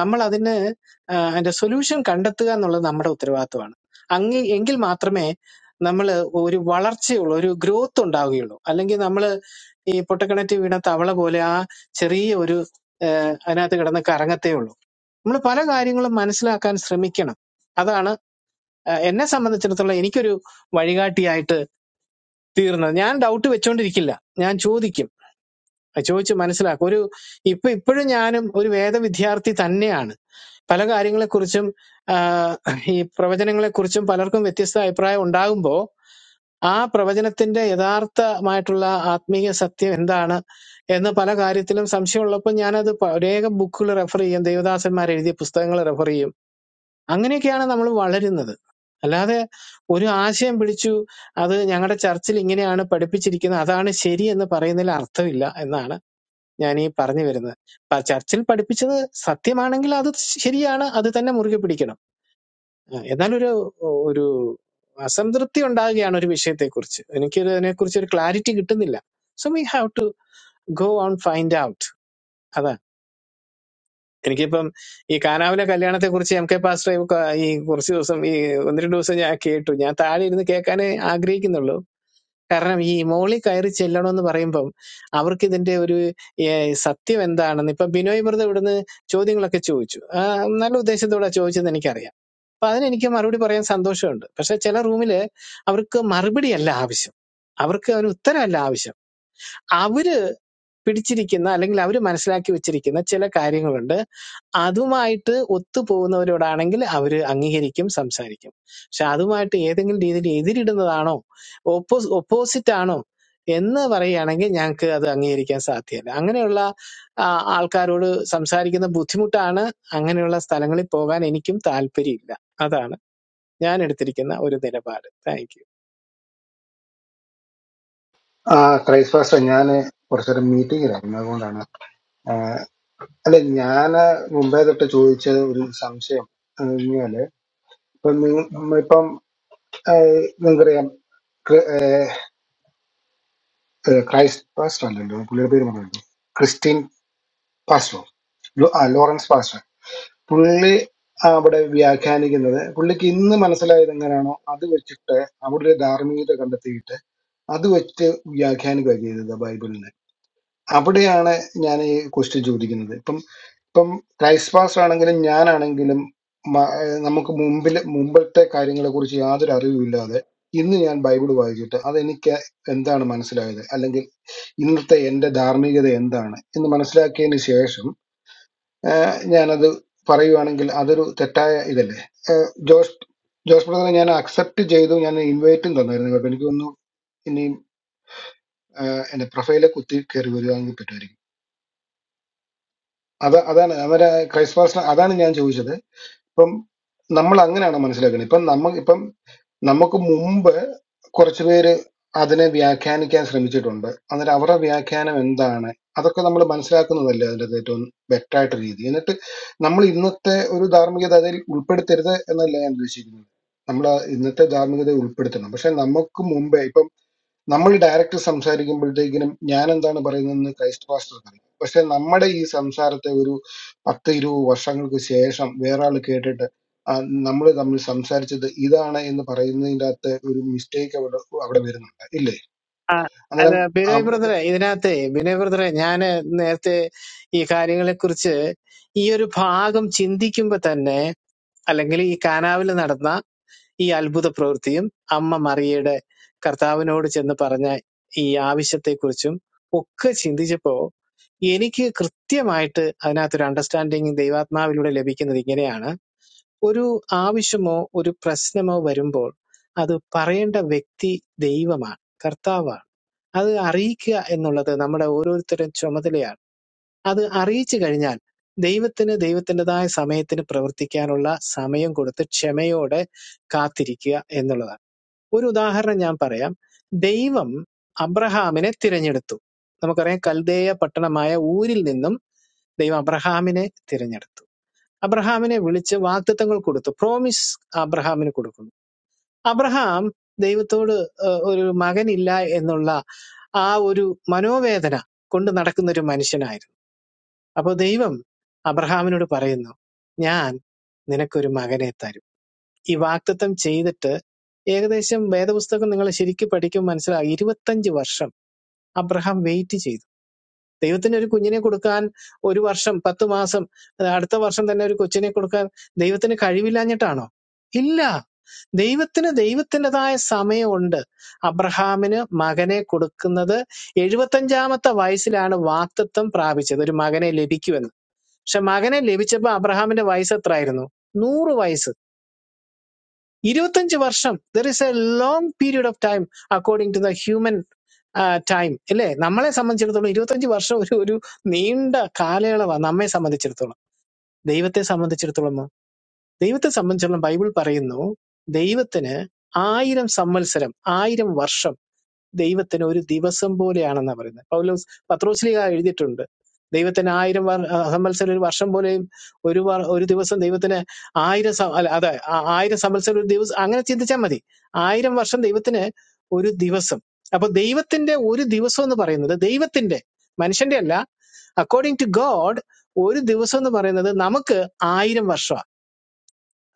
Speaker 6: നമ്മൾ അതിന് ആ, അതിന്റെ സൊല്യൂഷൻ കണ്ടെത്തുക എന്നുള്ളത് നമ്മുടെ ഉത്തരവാദിത്വമാണ് അങ്ങി എങ്കിൽ മാത്രമേ നമ്മൾ ഒരു വളർച്ചയുള്ള ഒരു ഗ്രോത്ത് ഉണ്ടാവുകയുള്ളൂ അല്ലെങ്കിൽ നമ്മൾ ഈ പൊട്ടക്കിണറ്റ് വീണ തവള പോലെ ആ ചെറിയ ഒരു അതിനകത്ത് കിടന്ന് കറങ്ങത്തേ ഉള്ളൂ നമ്മൾ പല കാര്യങ്ങളും മനസ്സിലാക്കാൻ ശ്രമിക്കണം അതാണ് ആ, എന്നെ സംബന്ധിച്ചിടത്തോളം എനിക്കൊരു വഴികാട്ടിയായിട്ട് തീർന്നത് ഞാൻ ഡൗട്ട് വെച്ചോണ്ടിരിക്കില്ല ഞാൻ ചോദിക്കും ചോദിച്ച് മനസ്സിലാക്കും ഒരു ഇപ്പൊ ഇപ്പോഴും ഞാനും ഒരു വേദ വിദ്യാർത്ഥി തന്നെയാണ് പല കാര്യങ്ങളെക്കുറിച്ചും ആ, ഈ പ്രവചനങ്ങളെക്കുറിച്ചും പലർക്കും വ്യത്യസ്ത അഭിപ്രായം ഉണ്ടാകുമ്പോൾ ആ പ്രവചനത്തിന്റെ യഥാർത്ഥമായിട്ടുള്ള ആത്മീയ സത്യം എന്താണ് എന്ന് പല കാര്യത്തിലും സംശയമുള്ളപ്പോൾ ഞാനത് പ- അനേക ബുക്കുകൾ റെഫർ ചെയ്യും ദേവദാസന്മാർ എഴുതിയ പുസ്തകങ്ങൾ റെഫർ ചെയ്യും അങ്ങനെയൊക്കെയാണ് നമ്മൾ വളരുന്നത് അല്ലാതെ ഒരു ആശയം പിടിച്ചു അത് ഞങ്ങളുടെ ചർച്ചിൽ ഇങ്ങനെയാണ് പഠിപ്പിച്ചിരിക്കുന്നത് അതാണ് ശരി എന്ന് പറയുന്നതിൽ അർത്ഥമില്ല എന്നാണ് ഞാൻ ഈ പറഞ്ഞു വരുന്നത് പ- ചർച്ചിൽ പഠിപ്പിച്ചത് സത്യമാണെങ്കിൽ അത് ശരിയാണ് അത് തന്നെ മുറുകെ പിടിക്കണം ആ, എന്നാൽ ഒരു ഒരു അസംതൃപ്തി ഉണ്ടാകുകയാണ് ഒരു വിഷയത്തെക്കുറിച്ച് എനിക്ക് അതിനെക്കുറിച്ച് ഒരു ക്ലാരിറ്റി കിട്ടുന്നില്ല so we have to go on find out അതാ എനിക്കിപ്പം ഈ കാനാവിലെ കല്യാണത്തെ കുറിച്ച് എം കെ പാസ്റ്റർ ഈ കുറച്ച് ദിവസം ഈ ഒന്ന് രണ്ട് ദിവസം ഞാൻ കേട്ടു ഞാൻ താഴെ ഇരുന്ന് കേൾക്കാനേ ആഗ്രഹിക്കുന്നുള്ളൂ കാരണം ഈ മോളിൽ കയറി ചെല്ലണം എന്ന് പറയുമ്പം അവർക്ക് ഇതിന്റെ ഒരു ഏഹ്, സത്യം എന്താണെന്ന് ഇപ്പൊ ബിനോയ് മൃത ഇവിടുന്ന് ചോദ്യങ്ങളൊക്കെ ചോദിച്ചു ആ, നല്ല ഉദ്ദേശത്തോടെ ചോദിച്ചത് എനിക്കറിയാം അപ്പൊ അതിനെനിക്ക് മറുപടി പറയാൻ സന്തോഷമുണ്ട് പക്ഷെ ചില റൂമില് അവർക്ക് മറുപടിയല്ല ആവശ്യം അവർക്ക് ഒരു ഉത്തരമല്ല ആവശ്യം അവര് പിടിച്ചിരിക്കുന്ന അല്ലെങ്കിൽ അവര് മനസ്സിലാക്കി വെച്ചിരിക്കുന്ന ചില കാര്യങ്ങളുണ്ട് അതുമായിട്ട് ഒത്തുപോകുന്നവരോടാണെങ്കിൽ അവർ അംഗീകരിക്കും സംസാരിക്കും പക്ഷെ അതുമായിട്ട് ഏതെങ്കിലും രീതിയിൽ എതിരിടുന്നതാണോ ഓപ്പോ ഓപ്പോസിറ്റ് ആണോ എന്ന് പറയുകയാണെങ്കിൽ ഞങ്ങൾക്ക് അത് അംഗീകരിക്കാൻ സാധ്യമല്ല അങ്ങനെയുള്ള ആ, ആൾക്കാരോട് സംസാരിക്കുന്ന ബുദ്ധിമുട്ടാണ് അങ്ങനെയുള്ള സ്ഥലങ്ങളിൽ പോകാൻ എനിക്കും താല്പര്യമില്ല അതാണ് ഞാൻ എടുത്തിരിക്കുന്ന ഒരു നിലപാട് താങ്ക് യു
Speaker 1: ആ ക്രൈസ്റ്റ് ഫാസ്റ്റർ ഞാൻ കുറച്ചൊരു മീറ്റിംഗിലായിരുന്നു അതുകൊണ്ടാണ് അല്ല ഞാൻ മുമ്പേ തൊട്ട് ചോദിച്ച ഒരു സംശയം എന്ന് പറഞ്ഞാല് ഇപ്പം നിങ്ങ- നമ്മളിപ്പം ഏഹ്, നിങ്ങൾക്കറിയാം ക്രി- ഏഹ്, ഏഹ്, ക്രൈസ്റ്റ് പാസ്റ്റർ അല്ലല്ലോ പുള്ളിയുടെ പേര് പറഞ്ഞല്ലോ ക്രിസ്റ്റീൻ പാസ്റ്റർ ലോ- ആ, ലോറൻസ് പാസ്റ്റർ പുള്ളി അവിടെ വ്യാഖ്യാനിക്കുന്നത് പുള്ളിക്ക് ഇന്ന് മനസ്സിലായത് എങ്ങനെയാണോ അത് വെച്ചിട്ട് അവിടെ ഒരു ധാർമ്മികത കണ്ടെത്തിയിട്ട് അത് വെച്ച് വ്യാഖ്യാനിക്കുക ചെയ്തത് ബൈബിളിനെ അവിടെയാണ് ഞാൻ ഈ ക്വസ്റ്റ്യൻ ചോദിക്കുന്നത് ഇപ്പം ഇപ്പം ക്രൈസ്റ്റ് പാസ്റ്റർ ആണെങ്കിലും ഞാനാണെങ്കിലും മ- ഏഹ് നമുക്ക് മുമ്പിൽ മുമ്പത്തെ കാര്യങ്ങളെ കുറിച്ച് യാതൊരു അറിവുമില്ലാതെ ഇന്ന് ഞാൻ ബൈബിൾ വായിച്ചിട്ട് അതെനിക്ക് എന്താണ് മനസ്സിലായത് അല്ലെങ്കിൽ ഇന്നത്തെ എൻ്റെ ധാർമ്മികത എന്താണ് എന്ന് മനസ്സിലാക്കിയതിന് ശേഷം ഏഹ് ഞാനത് പറയുവാണെങ്കിൽ അതൊരു തെറ്റായ ഇതല്ലേ ഏഹ് ജോസ് ജോസ് ബ്രദറെ ഞാൻ അക്സെപ്റ്റ് ചെയ്തു ഞാൻ ഇൻവൈറ്റും തന്നായിരുന്നു കേട്ടോ എനിക്ക് തോന്നുന്നു ഇനിയും ഏഹ് എൻ്റെ പ്രൊഫൈലെ കുത്തി കയറി വരുവാണെങ്കിൽ പറ്റുമായിരിക്കും അത് അതാണ് അവരെ ക്രൈസ്തവാസിന് അതാണ് ഞാൻ ചോദിച്ചത് ഇപ്പം നമ്മൾ അങ്ങനെയാണ് മനസ്സിലാക്കുന്നത് ഇപ്പം നമ്മ ഇപ്പം നമുക്ക് മുമ്പ് കുറച്ച് പേര് അതിനെ വ്യാഖ്യാനിക്കാൻ ശ്രമിച്ചിട്ടുണ്ട് അന്നേരം അവരുടെ വ്യാഖ്യാനം എന്താണ് അതൊക്കെ നമ്മൾ മനസ്സിലാക്കുന്നതല്ലേ അതിൻ്റെ ഏറ്റവും ബെറ്റർ ആയിട്ട് രീതി എന്നിട്ട് നമ്മൾ ഇന്നത്തെ ഒരു ധാർമ്മികത അതിൽ ഉൾപ്പെടുത്തരുത് എന്നല്ല ഞാൻ ഉദ്ദേശിക്കുന്നത് നമ്മൾ ഇന്നത്തെ ധാർമ്മികത ഉൾപ്പെടുത്തണം പക്ഷെ നമുക്ക് മുമ്പേ ഇപ്പം നമ്മൾ ഡയറക്റ്റ് സംസാരിക്കുമ്പോഴത്തേക്കിനും ഞാൻ എന്താണ് പറയുന്നതെന്ന് ക്രൈസ്റ്റ് പാസ്റ്റർക്ക് അറിയാം പക്ഷെ നമ്മുടെ ഈ സംസാരത്തെ ഒരു പത്ത് ഇരുപത് വർഷങ്ങൾക്ക് ശേഷം വേറെ ആൾ കേട്ടിട്ട് നമ്മൾ തമ്മിൽ സംസാരിച്ചത് ഇതാണ് എന്ന് പറയുന്നതിൻ്റെ അകത്ത് ഒരു മിസ്റ്റേക്ക് അവിടെ അവിടെ വരുന്നുണ്ട് ഇല്ലേ
Speaker 6: ആ, അത്
Speaker 1: അന്നേരം
Speaker 6: ബിനോയ്
Speaker 1: അവ-
Speaker 6: ബ്രദറെ ഇതിനകത്തെ ബിനോയ് ബ്രദറെ ഞാൻ നേരത്തെ ഈ കാര്യങ്ങളെക്കുറിച്ച് ഈ ഒരു ഭാഗം ചിന്തിക്കുമ്പോൾ തന്നെ അല്ലെങ്കിൽ ഈ കാനാവിൽ നടന്ന ഈ അത്ഭുത പ്രവൃത്തിയും അമ്മ മറിയയുടെ കർത്താവിനോട് ചെന്ന് പറഞ്ഞ ഈ ആവശ്യത്തെക്കുറിച്ചും ഒക്കെ ചിന്തിച്ചപ്പോ എനിക്ക് കൃത്യമായിട്ട് അതിനകത്തൊരു അണ്ടർസ്റ്റാൻഡിങ് ദൈവാത്മാവിലൂടെ ലഭിക്കുന്നത് ഇങ്ങനെയാണ് ഒരു ആവശ്യമോ ഒരു പ്രശ്നമോ വരുമ്പോൾ അത് പറയേണ്ട വ്യക്തി ദൈവമാണ് കർത്താവാണ് അത് അറിയിക്കുക എന്നുള്ളത് നമ്മുടെ ഓരോരുത്തരും ചുമതലയാണ് അത് അറിയിച്ചു കഴിഞ്ഞാൽ ദൈവത്തിന് ദൈവത്തിൻ്റെതായ സമയത്തിന് പ്രവർത്തിക്കാനുള്ള സമയം കൊടുത്ത് ക്ഷമയോടെ കാത്തിരിക്കുക എന്നുള്ളതാണ് ഒരു ഉദാഹരണം ഞാൻ പറയാം ദൈവം അബ്രഹാമിനെ തിരഞ്ഞെടുത്തു നമുക്കറിയാം കൽദേയ പട്ടണമായ ഊരിൽ നിന്നും ദൈവം അബ്രഹാമിനെ തിരഞ്ഞെടുത്തു അബ്രഹാമിനെ വിളിച്ച് വാഗ്ദത്തങ്ങൾ കൊടുത്തു പ്രോമിസ് അബ്രഹാമിന് കൊടുക്കുന്നു അബ്രഹാം ദൈവത്തോട് ഏഹ്, ഒരു മകനില്ല എന്നുള്ള ആ ഒരു മനോവേദന കൊണ്ട് നടക്കുന്ന ഒരു മനുഷ്യനായിരുന്നു അപ്പോൾ ദൈവം അബ്രഹാമിനോട് പറയുന്നു ഞാൻ നിനക്കൊരു മകനെ തരും ഈ വാക്തത്വം ചെയ്തിട്ട് ഏകദേശം വേദപുസ്തകം നിങ്ങൾ ശരിക്കും പഠിക്കും മനസ്സിലാകും ഇരുപത്തഞ്ച് വർഷം അബ്രഹാം വെയിറ്റ് ചെയ്തു ദൈവത്തിന് ഒരു കുഞ്ഞിനെ കൊടുക്കാൻ ഒരു വർഷം പത്ത് മാസം അത് അടുത്ത വർഷം തന്നെ ഒരു കൊച്ചിനെ കൊടുക്കാൻ ദൈവത്തിന് കഴിവില്ലാഞ്ഞിട്ടാണോ ഇല്ല ദൈവത്തിന് ദൈവത്തിൻ്റെതായ സമയമുണ്ട് അബ്രഹാമിന് മകനെ കൊടുക്കുന്നത് എഴുപത്തഞ്ചാമത്തെ വയസ്സിലാണ് വാക്തത്വം പ്രാപിച്ചത് ഒരു മകനെ ലഭിക്കുമെന്ന് പക്ഷെ മകനെ ലഭിച്ചപ്പോൾ അബ്രഹാമിന്റെ വയസ്സ് എത്രയായിരുന്നു നൂറ് വയസ്സ് ഇരുപത്തഞ്ച് വർഷം there is a long period of time according to the human time അല്ലേ നമ്മളെ സംബന്ധിച്ചിടത്തോളം ഇരുപത്തഞ്ച് വർഷം ഒരു ഒരു നീണ്ട കാലയളവാണ് നമ്മെ സംബന്ധിച്ചിടത്തോളം ദൈവത്തെ സംബന്ധിച്ചിടത്തോളമോ ദൈവത്തെ സംബന്ധിച്ചിടത്തോളം ബൈബിൾ പറയുന്നു ദൈവത്തിന് ആയിരം സംവത്സരം ആയിരം വർഷം ദൈവത്തിന് ഒരു ദിവസം പോലെയാണെന്നാണ് പറയുന്നത് പൗലോസ് പത്രോസ്ലിക എഴുതിയിട്ടുണ്ട് ദൈവത്തിന് ആയിരം വർ- ആ, സംവത്സരം ഒരു വർഷം പോലെയും ഒരു വർ- ഒരു ദിവസം ദൈവത്തിന് ആയിരം സം- അല്ല അതെ ആ, ആയിരം സംവത്സരം ഒരു ദിവസം അങ്ങനെ ചിന്തിച്ചാൽ മതി ആയിരം വർഷം ദൈവത്തിന് ഒരു ദിവസം അപ്പൊ ദൈവത്തിന്റെ ഒരു ദിവസം എന്ന് പറയുന്നത് ദൈവത്തിന്റെ മനുഷ്യന്റെ അല്ല അക്കോർഡിംഗ് ടു ഗോഡ് ഒരു ദിവസം എന്ന് പറയുന്നത് നമുക്ക് ആയിരം വർഷമാണ്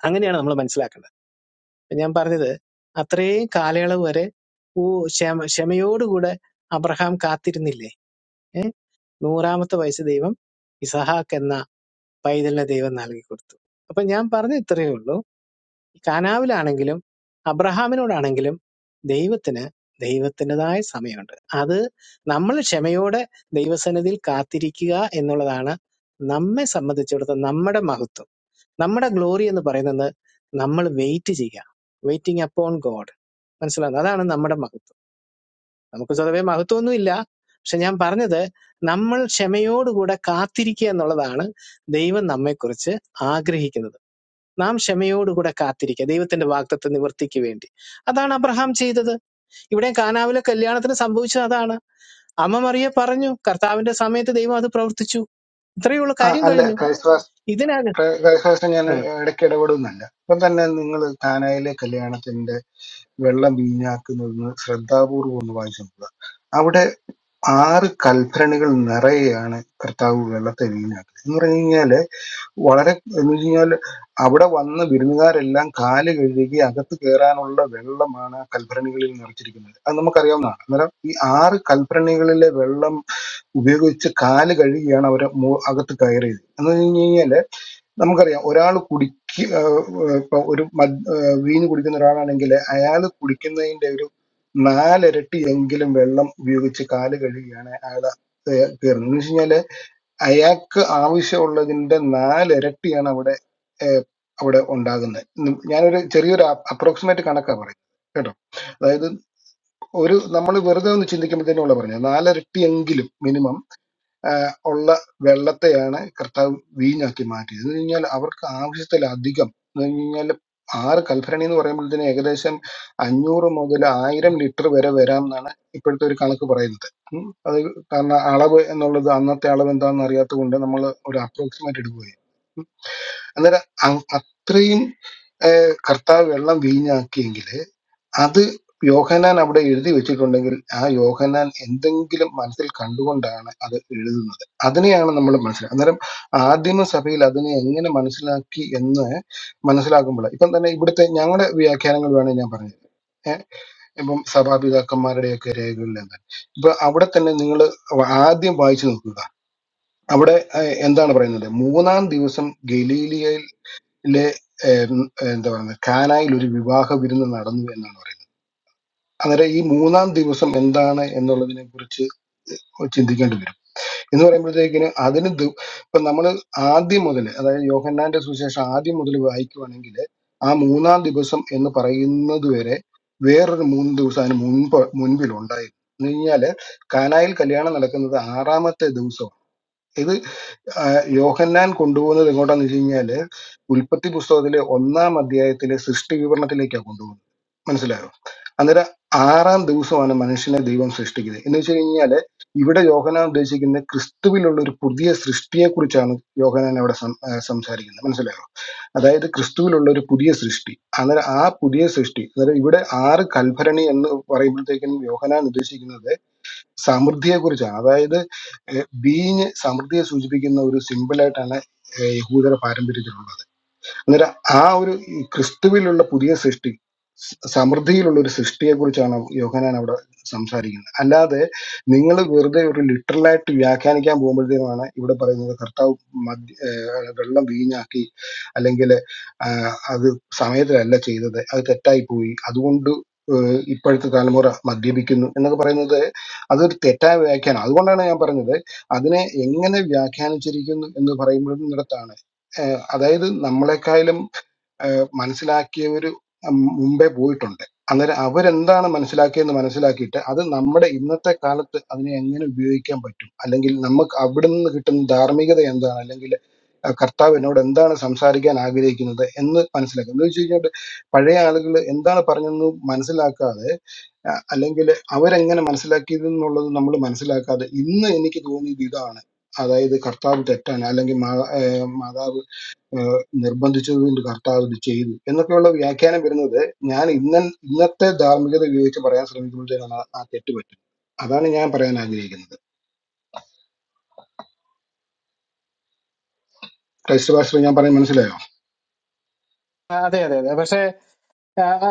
Speaker 6: അങ്ങനെയാണ് നമ്മൾ മനസ്സിലാക്കേണ്ടത് ഞാൻ പറഞ്ഞത് അത്രയും കാലയളവ് വരെ ഓ ക്ഷമ ക്ഷമയോടുകൂടെ അബ്രഹാം കാത്തിരുന്നില്ലേ ഏ നൂറാമത്തെ വയസ്സ് ദൈവം ഇസഹാക്ക് എന്ന പൈതലിനെ ദൈവം നൽകി കൊടുത്തു അപ്പൊ ഞാൻ പറഞ്ഞ ഇത്രയേ ഉള്ളൂ കാനാവിലാണെങ്കിലും അബ്രഹാമിനോടാണെങ്കിലും ദൈവത്തിന് ദൈവത്തിൻ്റെതായ സമയമുണ്ട് അത് നമ്മൾ ക്ഷമയോടെ ദൈവസന്നിധിയിൽ കാത്തിരിക്കുക എന്നുള്ളതാണ് നമ്മെ സംബന്ധിച്ചിടത്തോളം നമ്മുടെ മഹത്വം നമ്മുടെ ഗ്ലോറി എന്ന് പറയുന്നത് നമ്മൾ വെയിറ്റ് ചെയ്യുക വെയിറ്റിംഗ് അപ്പോൺ ഗോഡ് മനസ്സിലാകുന്നു അതാണ് നമ്മുടെ മഹത്വം നമുക്ക് സ്വതവേ മഹത്വമൊന്നുമില്ല പക്ഷെ ഞാൻ പറഞ്ഞത് നമ്മൾ ക്ഷമയോടുകൂടെ കാത്തിരിക്കുക എന്നുള്ളതാണ് ദൈവം നമ്മെക്കുറിച്ച് ആഗ്രഹിക്കുന്നത് നാം ക്ഷമയോടുകൂടെ കാത്തിരിക്കുക ദൈവത്തിന്റെ വാഗ്ദത്ത നിവർത്തിക്ക് വേണ്ടി അതാണ് അബ്രഹാം ചെയ്തത് ഇവിടെ കാനാവിലെ കല്യാണത്തിന് സംഭവിച്ചത് അതാണ് അമ്മ മറിയ പറഞ്ഞു കർത്താവിന്റെ സമയത്ത് ദൈവം അത് പ്രവർത്തിച്ചു ഇത്രയേ ഉള്ളൂ
Speaker 1: ആ,
Speaker 6: കാര്യം
Speaker 1: അല്ല
Speaker 6: കഴിഞ്ഞു
Speaker 1: ക്രൈസ്റ്റ് പാസ്റ്റർ-
Speaker 6: ഇതിനകം
Speaker 1: ക്രൈ- ക്രൈസ്റ്റ് പാസ്റ്റർ ഞാൻ
Speaker 6: ആ
Speaker 1: ഇടയ്ക്ക് ഇടപെടുന്നല്ല ഇപ്പം തന്നെ നിങ്ങൾ കാനായിലെ കല്യാണത്തിന്റെ വെള്ളം വീഞ്ഞാക്കുന്നത് ശ്രദ്ധാപൂർവം ഒന്ന് വായിച്ചു നോക്കുക ആറ് കൽഭരണികൾ നിറയെയാണ് കർത്താവ് വെള്ളത്തെ വീഞ്ഞാക്കുന്നത് എന്ന് പറഞ്ഞു കഴിഞ്ഞാല് വളരെ എന്ന് വെച്ച് കഴിഞ്ഞാല് അവിടെ വന്ന വിരുന്നുകാരെല്ലാം കാല് കഴുകി അകത്ത് കയറാനുള്ള വെള്ളമാണ് ആ കൽഭരണികളിൽ നിറച്ചിരിക്കുന്നത് അത് നമുക്കറിയാവുന്നതാണ് അന്നേരം ഈ ആറ് കൽഭരണികളിലെ വെള്ളം ഉപയോഗിച്ച് കാല് കഴുകിയാണ് അവർ അകത്ത് കയറിയത് എന്ന് പറഞ്ഞു കഴിഞ്ഞാല് നമുക്കറിയാം ഒരാൾ കുടിക്ക് ഇപ്പൊ ഒരു മദ് വീഞ്ഞ് കുടിക്കുന്ന ഒരാളാണെങ്കിൽ അയാൾ കുടിക്കുന്നതിന്റെ ഒരു നാലിരട്ടി എങ്കിലും വെള്ളം ഉപയോഗിച്ച് കാല് കഴുകിയാണ് അയാൾ കയറുന്നത് എന്ന് വെച്ച് കഴിഞ്ഞാല് അയാൾക്ക് ആവശ്യമുള്ളതിന്റെ നാലിരട്ടിയാണ് അവിടെ ഏഹ്, അവിടെ ഉണ്ടാകുന്നത് ഉം ഞാനൊരു ചെറിയൊരു അപ്രോക്സിമേറ്റ് കണക്കാ പറയുന്നത് കേട്ടോ അതായത് ഒരു നമ്മൾ വെറുതെ ഒന്ന് ചിന്തിക്കുമ്പോഴത്തേനുള്ള പറഞ്ഞത് നാലിരട്ടിയെങ്കിലും മിനിമം ഉള്ള വെള്ളത്തെയാണ് കർത്താവ് വീഞ്ഞാക്കി മാറ്റിയത് എന്ന് കഴിഞ്ഞാൽ അവർക്ക് ആവശ്യത്തിലധികം എന്ന് കഴിഞ്ഞാൽ ആറ് കൽഭരണി എന്ന് പറയുമ്പോഴത്തേന് ഏകദേശം അഞ്ഞൂറ് മുതൽ ആയിരം ലിറ്റർ വരെ വരാം എന്നാണ് ഇപ്പോഴത്തെ ഒരു കണക്ക് പറയുന്നത് ഉം. അത് കാരണം അളവ് എന്നുള്ളത് അന്നത്തെ അളവ് എന്താണെന്ന് അറിയാത്തത് കൊണ്ട് നമ്മൾ ഒരു അപ്രോക്സിമേറ്റ് എടുക്കുകയും അന്നേരം അ- അത്രയും ഏഹ് കർത്താവ് വെള്ളം വീഞ്ഞാക്കിയെങ്കിൽ അത് യോഹന്നാൻ അവിടെ എഴുതി വെച്ചിട്ടുണ്ടെങ്കിൽ ആ യോഹന്നാൻ എന്തെങ്കിലും മനസ്സിൽ കണ്ടുകൊണ്ടാണ് അത് എഴുതുന്നത് അതിനെയാണ് നമ്മൾ മനസ്സിലാക്കുക അന്നേരം ആദിമ സഭയിൽ അതിനെ എങ്ങനെ മനസ്സിലാക്കി എന്ന് മനസ്സിലാക്കുമ്പോൾ ഇപ്പം തന്നെ ഇവിടുത്തെ ഞങ്ങളുടെ വ്യാഖ്യാനങ്ങൾ വേണേൽ ഞാൻ പറഞ്ഞു ഏഹ് ഇപ്പം സഭാപിതാക്കന്മാരുടെയൊക്കെ രേഖകളിൽ എന്താ ഇപ്പൊ അവിടെ തന്നെ നിങ്ങൾ ആദ്യം വായിച്ചു നോക്കുക അവിടെ ഏഹ്, എന്താണ് പറയുന്നത് മൂന്നാം ദിവസം ഗലീലിയയിലെ ഏഹ്, എന്താ പറയുന്നത് കാനായിൽ ഒരു വിവാഹ വിരുന്ന് നടന്നു എന്നാണ് പറയുന്നത് അന്നേരം ഈ മൂന്നാം ദിവസം എന്താണ് എന്നുള്ളതിനെ കുറിച്ച് ചിന്തിക്കേണ്ടി വരും എന്ന് പറയുമ്പോഴത്തേക്കിന് അതിന് ദു- ഇപ്പൊ നമ്മൾ ആദ്യം മുതൽ അതായത് യോഹന്നാന്റെ സുവിശേഷം ആദ്യം മുതൽ വായിക്കുവാണെങ്കിൽ ആ മൂന്നാം ദിവസം എന്ന് പറയുന്നത് വരെ വേറൊരു മൂന്ന് ദിവസം അതിന് മുൻപ് മുൻപിൽ ഉണ്ടായിരുന്നു എന്ന് കഴിഞ്ഞാല് കാനായിൽ കല്യാണം നടക്കുന്നത് ആറാമത്തെ ദിവസമാണ് ഇത് ആ, യോഹന്നാൻ കൊണ്ടുപോകുന്നത് എങ്ങോട്ടാന്ന് വെച്ച് കഴിഞ്ഞാല് ഉൽപ്പത്തി പുസ്തകത്തിലെ ഒന്നാം അധ്യായത്തിലെ സൃഷ്ടി വിവരണത്തിലേക്കാണ് കൊണ്ടുപോകുന്നത് മനസ്സിലായോ അന്നേരം ആറാം ദിവസമാണ് മനുഷ്യനെ ദൈവം സൃഷ്ടിക്കുന്നത് എന്ന് വെച്ച് കഴിഞ്ഞാല് ഇവിടെ യോഹനാൻ ഉദ്ദേശിക്കുന്നത് ക്രിസ്തുവിലുള്ള ഒരു പുതിയ സൃഷ്ടിയെ കുറിച്ചാണ് യോഹനാൻ അവിടെ സം- ആ, സംസാരിക്കുന്നത് മനസ്സിലായോ അതായത് ക്രിസ്തുവിലുള്ള ഒരു പുതിയ സൃഷ്ടി അന്നേരം ആ പുതിയ സൃഷ്ടി അന്നേരം ഇവിടെ ആറ് കൽഭരണി എന്ന് പറയുമ്പോഴത്തേക്കും യോഹനാൻ ഉദ്ദേശിക്കുന്നത് സമൃദ്ധിയെ കുറിച്ചാണ് അതായത് ബീഞ്ഞ് സമൃദ്ധിയെ സൂചിപ്പിക്കുന്ന ഒരു സിമ്പിളായിട്ടാണ് യഹൂദര പാരമ്പര്യത്തിലുള്ളത് അന്നേരം ആ ഒരു ഈ ക്രിസ്തുവിലുള്ള പുതിയ സൃഷ്ടി സ- സമൃദ്ധിയിലുള്ള ഒരു സൃഷ്ടിയെക്കുറിച്ചാണ് യോഹനാൻ അവിടെ സംസാരിക്കുന്നത് അല്ലാതെ നിങ്ങൾ വെറുതെ ഒരു ലിറ്ററലായിട്ട് വ്യാഖ്യാനിക്കാൻ പോകുമ്പോഴത്തേക്കുമാണ് ഇവിടെ പറയുന്നത് കർത്താവ് മദ്യ ഏഹ് വെള്ളം വീഞ്ഞാക്കി അല്ലെങ്കിൽ അത് സമയത്തിലല്ല ചെയ്തത് അത് തെറ്റായി പോയി അതുകൊണ്ട് ഏഹ് ഇപ്പോഴത്തെ തലമുറ മദ്യപിക്കുന്നു എന്നൊക്കെ പറയുന്നത് അതൊരു തെറ്റായ വ്യാഖ്യാനം അതുകൊണ്ടാണ് ഞാൻ പറഞ്ഞത് അതിനെ എങ്ങനെ വ്യാഖ്യാനിച്ചിരിക്കുന്നു എന്ന് പറയുമ്പോഴത്താണ് അതായത് നമ്മളെക്കാളും മനസ്സിലാക്കിയവർ മുമ്പേ പോയിട്ടുണ്ട് അന്നേരം അവരെന്താണ് മനസ്സിലാക്കിയതെന്ന് മനസ്സിലാക്കിയിട്ട് അത് നമ്മുടെ ഇന്നത്തെ കാലത്ത് അതിനെ എങ്ങനെ ഉപയോഗിക്കാൻ പറ്റും അല്ലെങ്കിൽ നമുക്ക് അവിടെ നിന്ന് കിട്ടുന്ന ധാർമ്മികത എന്താണ് അല്ലെങ്കിൽ ആ, കർത്താവ് എന്നോട് എന്താണ് സംസാരിക്കാൻ ആഗ്രഹിക്കുന്നത് എന്ന് മനസ്സിലാക്കുക എന്ന് വെച്ച് കഴിഞ്ഞാൽ പഴയ ആളുകൾ എന്താണ് പറഞ്ഞതെന്ന് മനസ്സിലാക്കാതെ അല്ലെങ്കിൽ അവരെങ്ങനെ മനസ്സിലാക്കിയത് എന്നുള്ളത് നമ്മൾ മനസ്സിലാക്കാതെ ഇന്ന് എനിക്ക് തോന്നിയത് ഇതാണ് അതായത് കർത്താവ് തെറ്റാണ് അല്ലെങ്കിൽ മാ- ഏഹ് മാതാവ് നിർബന്ധിച്ചതുകൊണ്ട് കർത്താവ് ഇത് ചെയ്തു എന്നൊക്കെയുള്ള വ്യാഖ്യാനം വരുന്നത് ഞാൻ ഇന്ന ഇന്നത്തെ ധാർമ്മികത ഉപയോഗിച്ച് പറയാൻ ശ്രമിക്കുമ്പോഴത്തേക്കാണ് ആ ആ തെറ്റ് പറ്റുന്നത് അതാണ് ഞാൻ പറയാൻ ആഗ്രഹിക്കുന്നത് ക്രൈസ്റ്റ് പാസ്റ്റർ ഞാൻ പറയാൻ മനസ്സിലായോ
Speaker 6: ആ, അതെ അതെ അതെ പക്ഷേ ആ, ആ,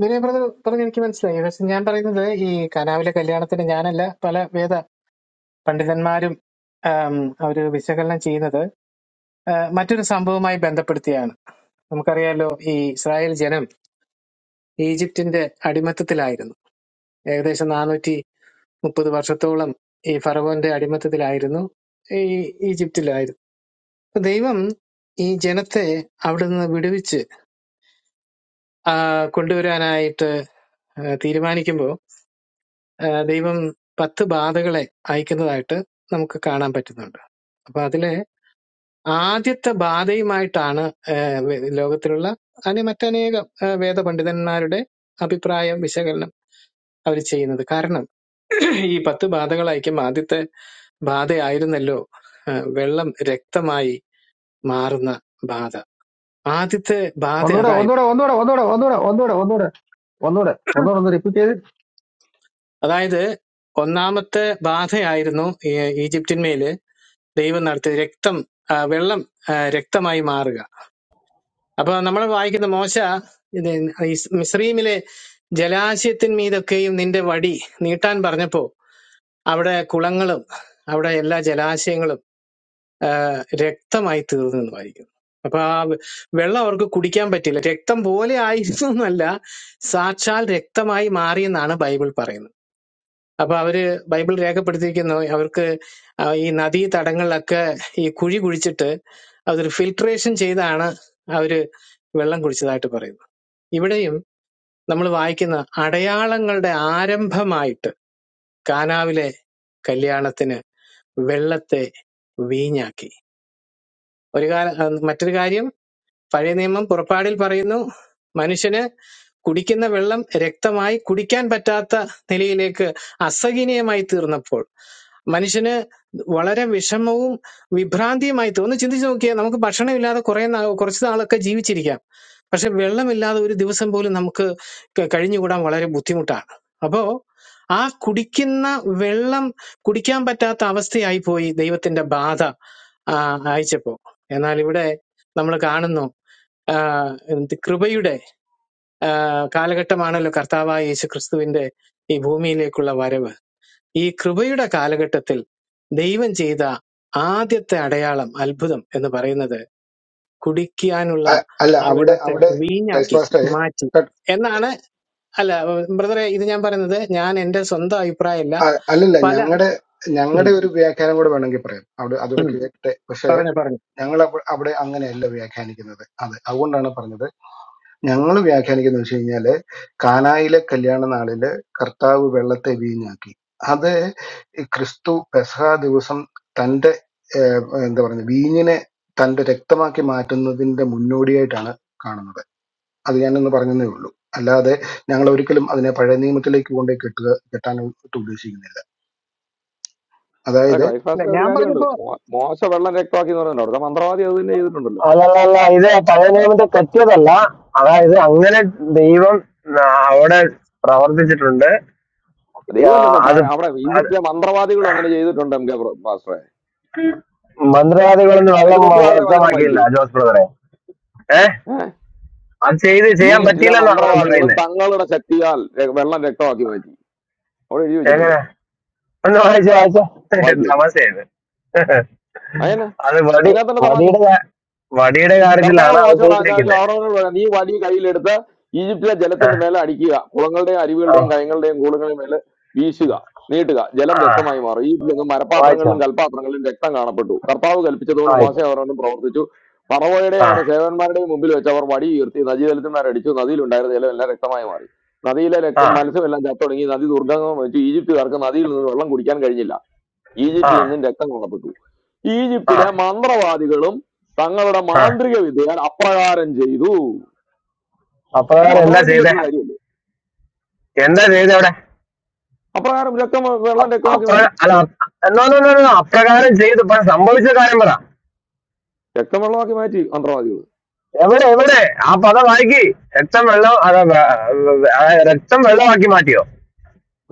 Speaker 6: വിനയ് ബ്രദർ പറഞ്ഞു എനിക്ക് മനസ്സിലായി പക്ഷെ ഞാൻ പറയുന്നത് ഈ കനാവിലെ കല്യാണത്തിന് ഞാനല്ല പല വേദ പണ്ഡിതന്മാരും ആം, അവര് വിശകലനം ചെയ്യുന്നത് ആ, മറ്റൊരു സംഭവവുമായി ബന്ധപ്പെടുത്തിയാണ് നമുക്കറിയാലോ ഈ ഇസ്രായേൽ ജനം ഈജിപ്തിന്റെ അടിമത്തത്തിലായിരുന്നു ഏകദേശം നാനൂറ്റി മുപ്പത് വർഷത്തോളം ഈ ഫറവോന്റെ അടിമത്തത്തിലായിരുന്നു ഈ ഈജിപ്തിലായിരുന്നു അപ്പൊ ദൈവം ഈ ജനത്തെ അവിടെ നിന്ന് വിടുവിച്ച് ആ, കൊണ്ടുവരാനായിട്ട് ആ, തീരുമാനിക്കുമ്പോൾ ആ, ദൈവം പത്ത് ബാധകളെ അയക്കുന്നതായിട്ട് നമുക്ക് കാണാൻ പറ്റുന്നുണ്ട് അപ്പൊ അതില് ആദ്യത്തെ ബാധയുമായിട്ടാണ് ഏഹ്, വേ- ലോകത്തിലുള്ള അനെ മറ്റനേകം ഏഹ്, വേദപണ്ഡിതന്മാരുടെ അഭിപ്രായം വിശകലനം അവർ ചെയ്യുന്നത് കാരണം ഈ പത്ത് ബാധകളായിരിക്കും ആദ്യത്തെ ബാധയായിരുന്നല്ലോ ഏഹ്, വെള്ളം രക്തമായി മാറുന്ന ബാധ ആദ്യത്തെ ബാധ
Speaker 9: Onora,
Speaker 6: അതായി
Speaker 9: Onora, Onora, Onora, Onora, Onora, Onora, Onora, Onora, Onora.
Speaker 6: അതായത് ഒന്നാമത്തെ ബാധയായിരുന്നു ഈ- ഈജിപ്തിന്മേല് ദൈവം നടത്തിയ രക്തം ആ, വെള്ളം ആ, രക്തമായി മാറുക അപ്പൊ നമ്മൾ വായിക്കുന്ന മോശ ഇത് ഇസ് മിസ്രയീമിലെ ജലാശയത്തിന്മീതൊക്കെയും നിന്റെ വടി നീട്ടാൻ പറഞ്ഞപ്പോ അവിടെ കുളങ്ങളും അവിടെ എല്ലാ ജലാശയങ്ങളും ആ, രക്തമായി തീർന്നു എന്ന് വായിക്കുന്നു അപ്പൊ ആ വെ- വെള്ളം അവർക്ക് കുടിക്കാൻ പറ്റില്ല രക്തം പോലെ ആയിരുന്നു എന്നല്ല സാക്ഷാൽ രക്തമായി മാറി എന്നാണ് ബൈബിൾ പറയുന്നത് അപ്പൊ അവര് ബൈബിൾ രേഖപ്പെടുത്തിയിരിക്കുന്നു അവർക്ക് ആ, ഈ നദീ തടങ്ങളിലൊക്കെ ഈ കുഴി കുഴിച്ചിട്ട് അതൊരു ഫിൽട്രേഷൻ ചെയ്താണ് അവര് വെള്ളം കുടിച്ചതായിട്ട് പറയുന്നത് ഇവിടെയും നമ്മൾ വായിക്കുന്ന അടയാളങ്ങളുടെ ആരംഭമായിട്ട് കാനാവിലെ കല്യാണത്തിന് വെള്ളത്തെ വീഞ്ഞാക്കി ഒരു കാല മറ്റൊരു കാര്യം പഴയ നിയമം പുറപ്പാടിൽ പറയുന്നു മനുഷ്യന് കുടിക്കുന്ന വെള്ളം രക്തമായി കുടിക്കാൻ പറ്റാത്ത നിലയിലേക്ക് അസഹനീയമായി തീർന്നപ്പോൾ മനുഷ്യന് വളരെ വിഷമവും വിഭ്രാന്തിയുമായി തോന്നി ചിന്തിച്ചു നോക്കിയാൽ നമുക്ക് ഭക്ഷണമില്ലാതെ കുറെ നാൾ കുറച്ച് നാളൊക്കെ ജീവിച്ചിരിക്കാം പക്ഷെ വെള്ളമില്ലാതെ ഒരു ദിവസം പോലും നമുക്ക് ക- കഴിഞ്ഞുകൂടാൻ വളരെ ബുദ്ധിമുട്ടാണ് അപ്പോ ആ കുടിക്കുന്ന വെള്ളം കുടിക്കാൻ പറ്റാത്ത അവസ്ഥയായി പോയി ദൈവത്തിന്റെ ബാധ ആ, അയച്ചപ്പോ എന്നാൽ ഇവിടെ നമ്മൾ കാണുന്നു ആ, എന്ത് കൃപയുടെ ആ, കാലഘട്ടമാണല്ലോ കർത്താവായ യേശു ക്രിസ്തുവിന്റെ ഈ ഭൂമിയിലേക്കുള്ള വരവ് ഈ കൃപയുടെ കാലഘട്ടത്തിൽ ദൈവം ചെയ്ത ആദ്യത്തെ അടയാളം അത്ഭുതം എന്ന് പറയുന്നത് കുടിക്കാനുള്ള
Speaker 1: അ- അല്ല
Speaker 6: ആ
Speaker 1: അവിടെ
Speaker 6: വെള്ളത്തെ
Speaker 1: അവിടെ ക്രൈസ്റ്റ്
Speaker 6: വീഞ്ഞാക്കി
Speaker 1: പാസ്റ്ററെ
Speaker 6: മാറ്റി
Speaker 1: കട്ട്-
Speaker 6: എന്നാണ് അല്ല ബ്രദറെ ഇത് ഞാൻ പറയുന്നത് ഞാൻ എന്റെ സ്വന്തം അഭിപ്രായമല്ല
Speaker 1: അ- അല്ലല്ല
Speaker 6: പല
Speaker 1: ഞങ്ങളുടെ
Speaker 6: ഉം,
Speaker 1: ഞങ്ങളുടെ ഒരു വ്യാഖ്യാനം കൂടെ വേണമെങ്കിൽ പറയാം അവിടെ അതോടെ
Speaker 6: ഉം,
Speaker 1: കേട്ടെ പക്ഷേ
Speaker 6: പറഞ്ഞു പറഞ്ഞു
Speaker 1: ഞങ്ങൾ അവ- അവിടെ അങ്ങനെയല്ല വ്യാഖ്യാനിക്കുന്നത് അത് അതുകൊണ്ടാണ് പറഞ്ഞത് ഞങ്ങൾ വ്യാഖ്യാനിക്കുന്നത് വെച്ച് കഴിഞ്ഞാല് കാനായിലെ കല്യാണ നാളില് കർത്താവ് വെള്ളത്തെ വീഞ്ഞാക്കി അത് ഈ ക്രിസ്തു പെസഹ ദിവസം തൻ്റെ ഏഹ്, എന്താ പറയുക വീഞ്ഞിനെ തൻ്റെ രക്തമാക്കി മാറ്റുന്നതിൻ്റെ മുന്നോടിയായിട്ടാണ് കാണുന്നത് അത് ഞാനൊന്ന് പറഞ്ഞതേ ഉള്ളൂ അല്ലാതെ ഞങ്ങൾ ഒരിക്കലും അതിനെ പഴയ നിയമത്തിലേക്ക് കൊണ്ടുപോയി കെട്ടുക കെട്ടാനായിട്ട് ഉദ്ദേശിക്കുന്നില്ല
Speaker 4: അല്ല
Speaker 1: അതായത്
Speaker 6: അല്ല
Speaker 4: ക്രൈഫാസിലെ ഒരു
Speaker 6: ഞാൻ
Speaker 4: കാര്യമുണ്ട്
Speaker 6: പറഞ്ഞപ്പോ
Speaker 4: മോ- മോശ വെള്ളം രക്തമാക്കി എന്ന് പറയുന്നുണ്ട് അവിടുത്തെ മന്ത്രവാദി അത് തന്നെ ചെയ്തിട്ടുണ്ടല്ലോ
Speaker 8: അല്ലല്ല അല്ല ഇത് പഴയ നിയമത്തെ തെറ്റിയതല്ല അതായത് അങ്ങനെ ദൈവം ആ, അവിടെ പ്രവർത്തിച്ചിട്ടുണ്ട് ആ,
Speaker 4: ദൈവമല്ലെന്ന്
Speaker 8: അത്
Speaker 4: അവിടെ
Speaker 8: അത്
Speaker 4: ഈജിപ്തിലെ മന്ത്രവാദികളും അങ്ങനെ ചെയ്തിട്ടുണ്ട് എം കെ പ്ര- പാസ്റ്ററെ
Speaker 8: മന്ത്രവാദികളൊന്നും വെള്ളം
Speaker 4: അതിന്റെ തൊട്ടുപാടത്തെ വചനം
Speaker 8: വ്യക്തമാക്കിയില്ല
Speaker 4: വായിച്ചേ
Speaker 8: ജോസ് ബ്രദറെ ഏഹ്
Speaker 4: ഏഹ്?
Speaker 8: അത് ചെയ്ത് ചെയ്യാൻ
Speaker 4: ഈജിപ്തിലെ
Speaker 8: പറ്റിയില്ലെന്നാണ് അവർ
Speaker 4: മന്ത്രവാദികളും
Speaker 8: പറയുന്നത്
Speaker 4: തങ്ങളുടെ ശക്തിയാൽ ര- വെള്ളം രക്തമാക്കി മാറ്റി അവിടെ എഴുതി വെച്ചിട്ടുണ്ട്
Speaker 8: എങ്ങനെ ഒന്ന് വായിച്ചോ വായിച്ചോ
Speaker 4: വായിച്ചു കേട്ടില്ല
Speaker 8: തമാശയാണ്
Speaker 4: അതിന്
Speaker 8: അത് വടി
Speaker 4: അതിനകത്ത് തന്നെ തമാശ
Speaker 8: വടിയുടെ കാ- വടിയുടെ
Speaker 4: കർത്താവ്
Speaker 8: കാര്യത്തിലാണ് അത്
Speaker 4: മോശം
Speaker 8: ചെയ്തിരിക്കുന്നത്
Speaker 4: ആഹ്റോനോട് പറയാം നീ വടി കയ്യിലെടുത്ത് ഈജിപ്തിലെ
Speaker 8: ആ
Speaker 4: ജലത്തിന്റെ മേലെ അടിക്കുക കുളങ്ങളുടെയും
Speaker 8: ഓ,
Speaker 4: അരുവികളുടെയും കയങ്ങളുടെയും കൂടുകളുടെയും മേലെ വീശുക നീട്ടുക ജലം
Speaker 8: ആ,
Speaker 4: രക്തമായി മാറും ഈജിപ്തിലെങ്ങും
Speaker 8: വായിച്ചോ
Speaker 4: മരപാത്രങ്ങളിലും കൽപാത്രങ്ങളിലും രക്തം കാണപ്പെട്ടു കർത്താവ് കൽപ്പിച്ചതുപോലെ മോശ
Speaker 8: വായിച്ചോ
Speaker 4: അവരോടും പ്രവർത്തിച്ചു പറവോയുടെയും
Speaker 8: ആ
Speaker 4: അവരുടെ സേവന്മാരുടെയും മുമ്പിൽ വെച്ച് അവർ വടി ഉയർത്തി നദീജലത്തിന്മാർ അടിച്ചു നദിയിലുണ്ടായിരുന്ന ജലം എല്ലാം രക്തമായി മാറി നദിയിലെ
Speaker 8: ആ
Speaker 4: രക്തം മത്സ്യമെല്ലാം ചത്തൊടുങ്ങി നദി ദുർഗന്ധം വെച്ചു ഈജിപ്തുകാർക്ക് നദിയിൽ നിന്ന് വെള്ളം കുടിക്കാൻ കഴിഞ്ഞില്ല
Speaker 8: ആ
Speaker 4: ഈജിപ്തിൽ നിന്നും രക്തം കാണപ്പെട്ടു
Speaker 8: ആ
Speaker 4: ഈജിപ്തിലെ മന്ത്രവാദികളും തങ്ങളുടെ
Speaker 8: ആ
Speaker 4: മാന്ത്രിക വിദ്യയാൽ അപ്രകാരം ചെയ്തു ഇത്
Speaker 8: അപ്രകാരം എന്താ
Speaker 4: മന്ത്രവാദിക്കും
Speaker 8: ചെയ്തേ
Speaker 4: പറ്റുന്ന കാര്യം
Speaker 8: എന്താ ചെയ്തേ അവിടെ
Speaker 4: അപ്രകാരം രക്തം വെള്ളം
Speaker 8: അപ്-
Speaker 4: രക്തമാക്കി
Speaker 8: അപ്ര
Speaker 4: മാറ്റി
Speaker 8: അല്ല അപ്- എന്നോ, എന്നോ, എന്നോ, എന്നോ, അപ്രകാരം ചെയ്ത് ഇപ്പൊ സംഭവിച്ച കാര്യം പറ
Speaker 4: രക്തം വെള്ളമാക്കി മാറ്റി മന്ത്രവാദികൾ
Speaker 8: എവിടെ എവിടെ ആ പദം വായിക്കി രക്തം വെള്ളം അതാ, വ- വ- ആ, രക്തം വെള്ളമാക്കി മാറ്റിയോ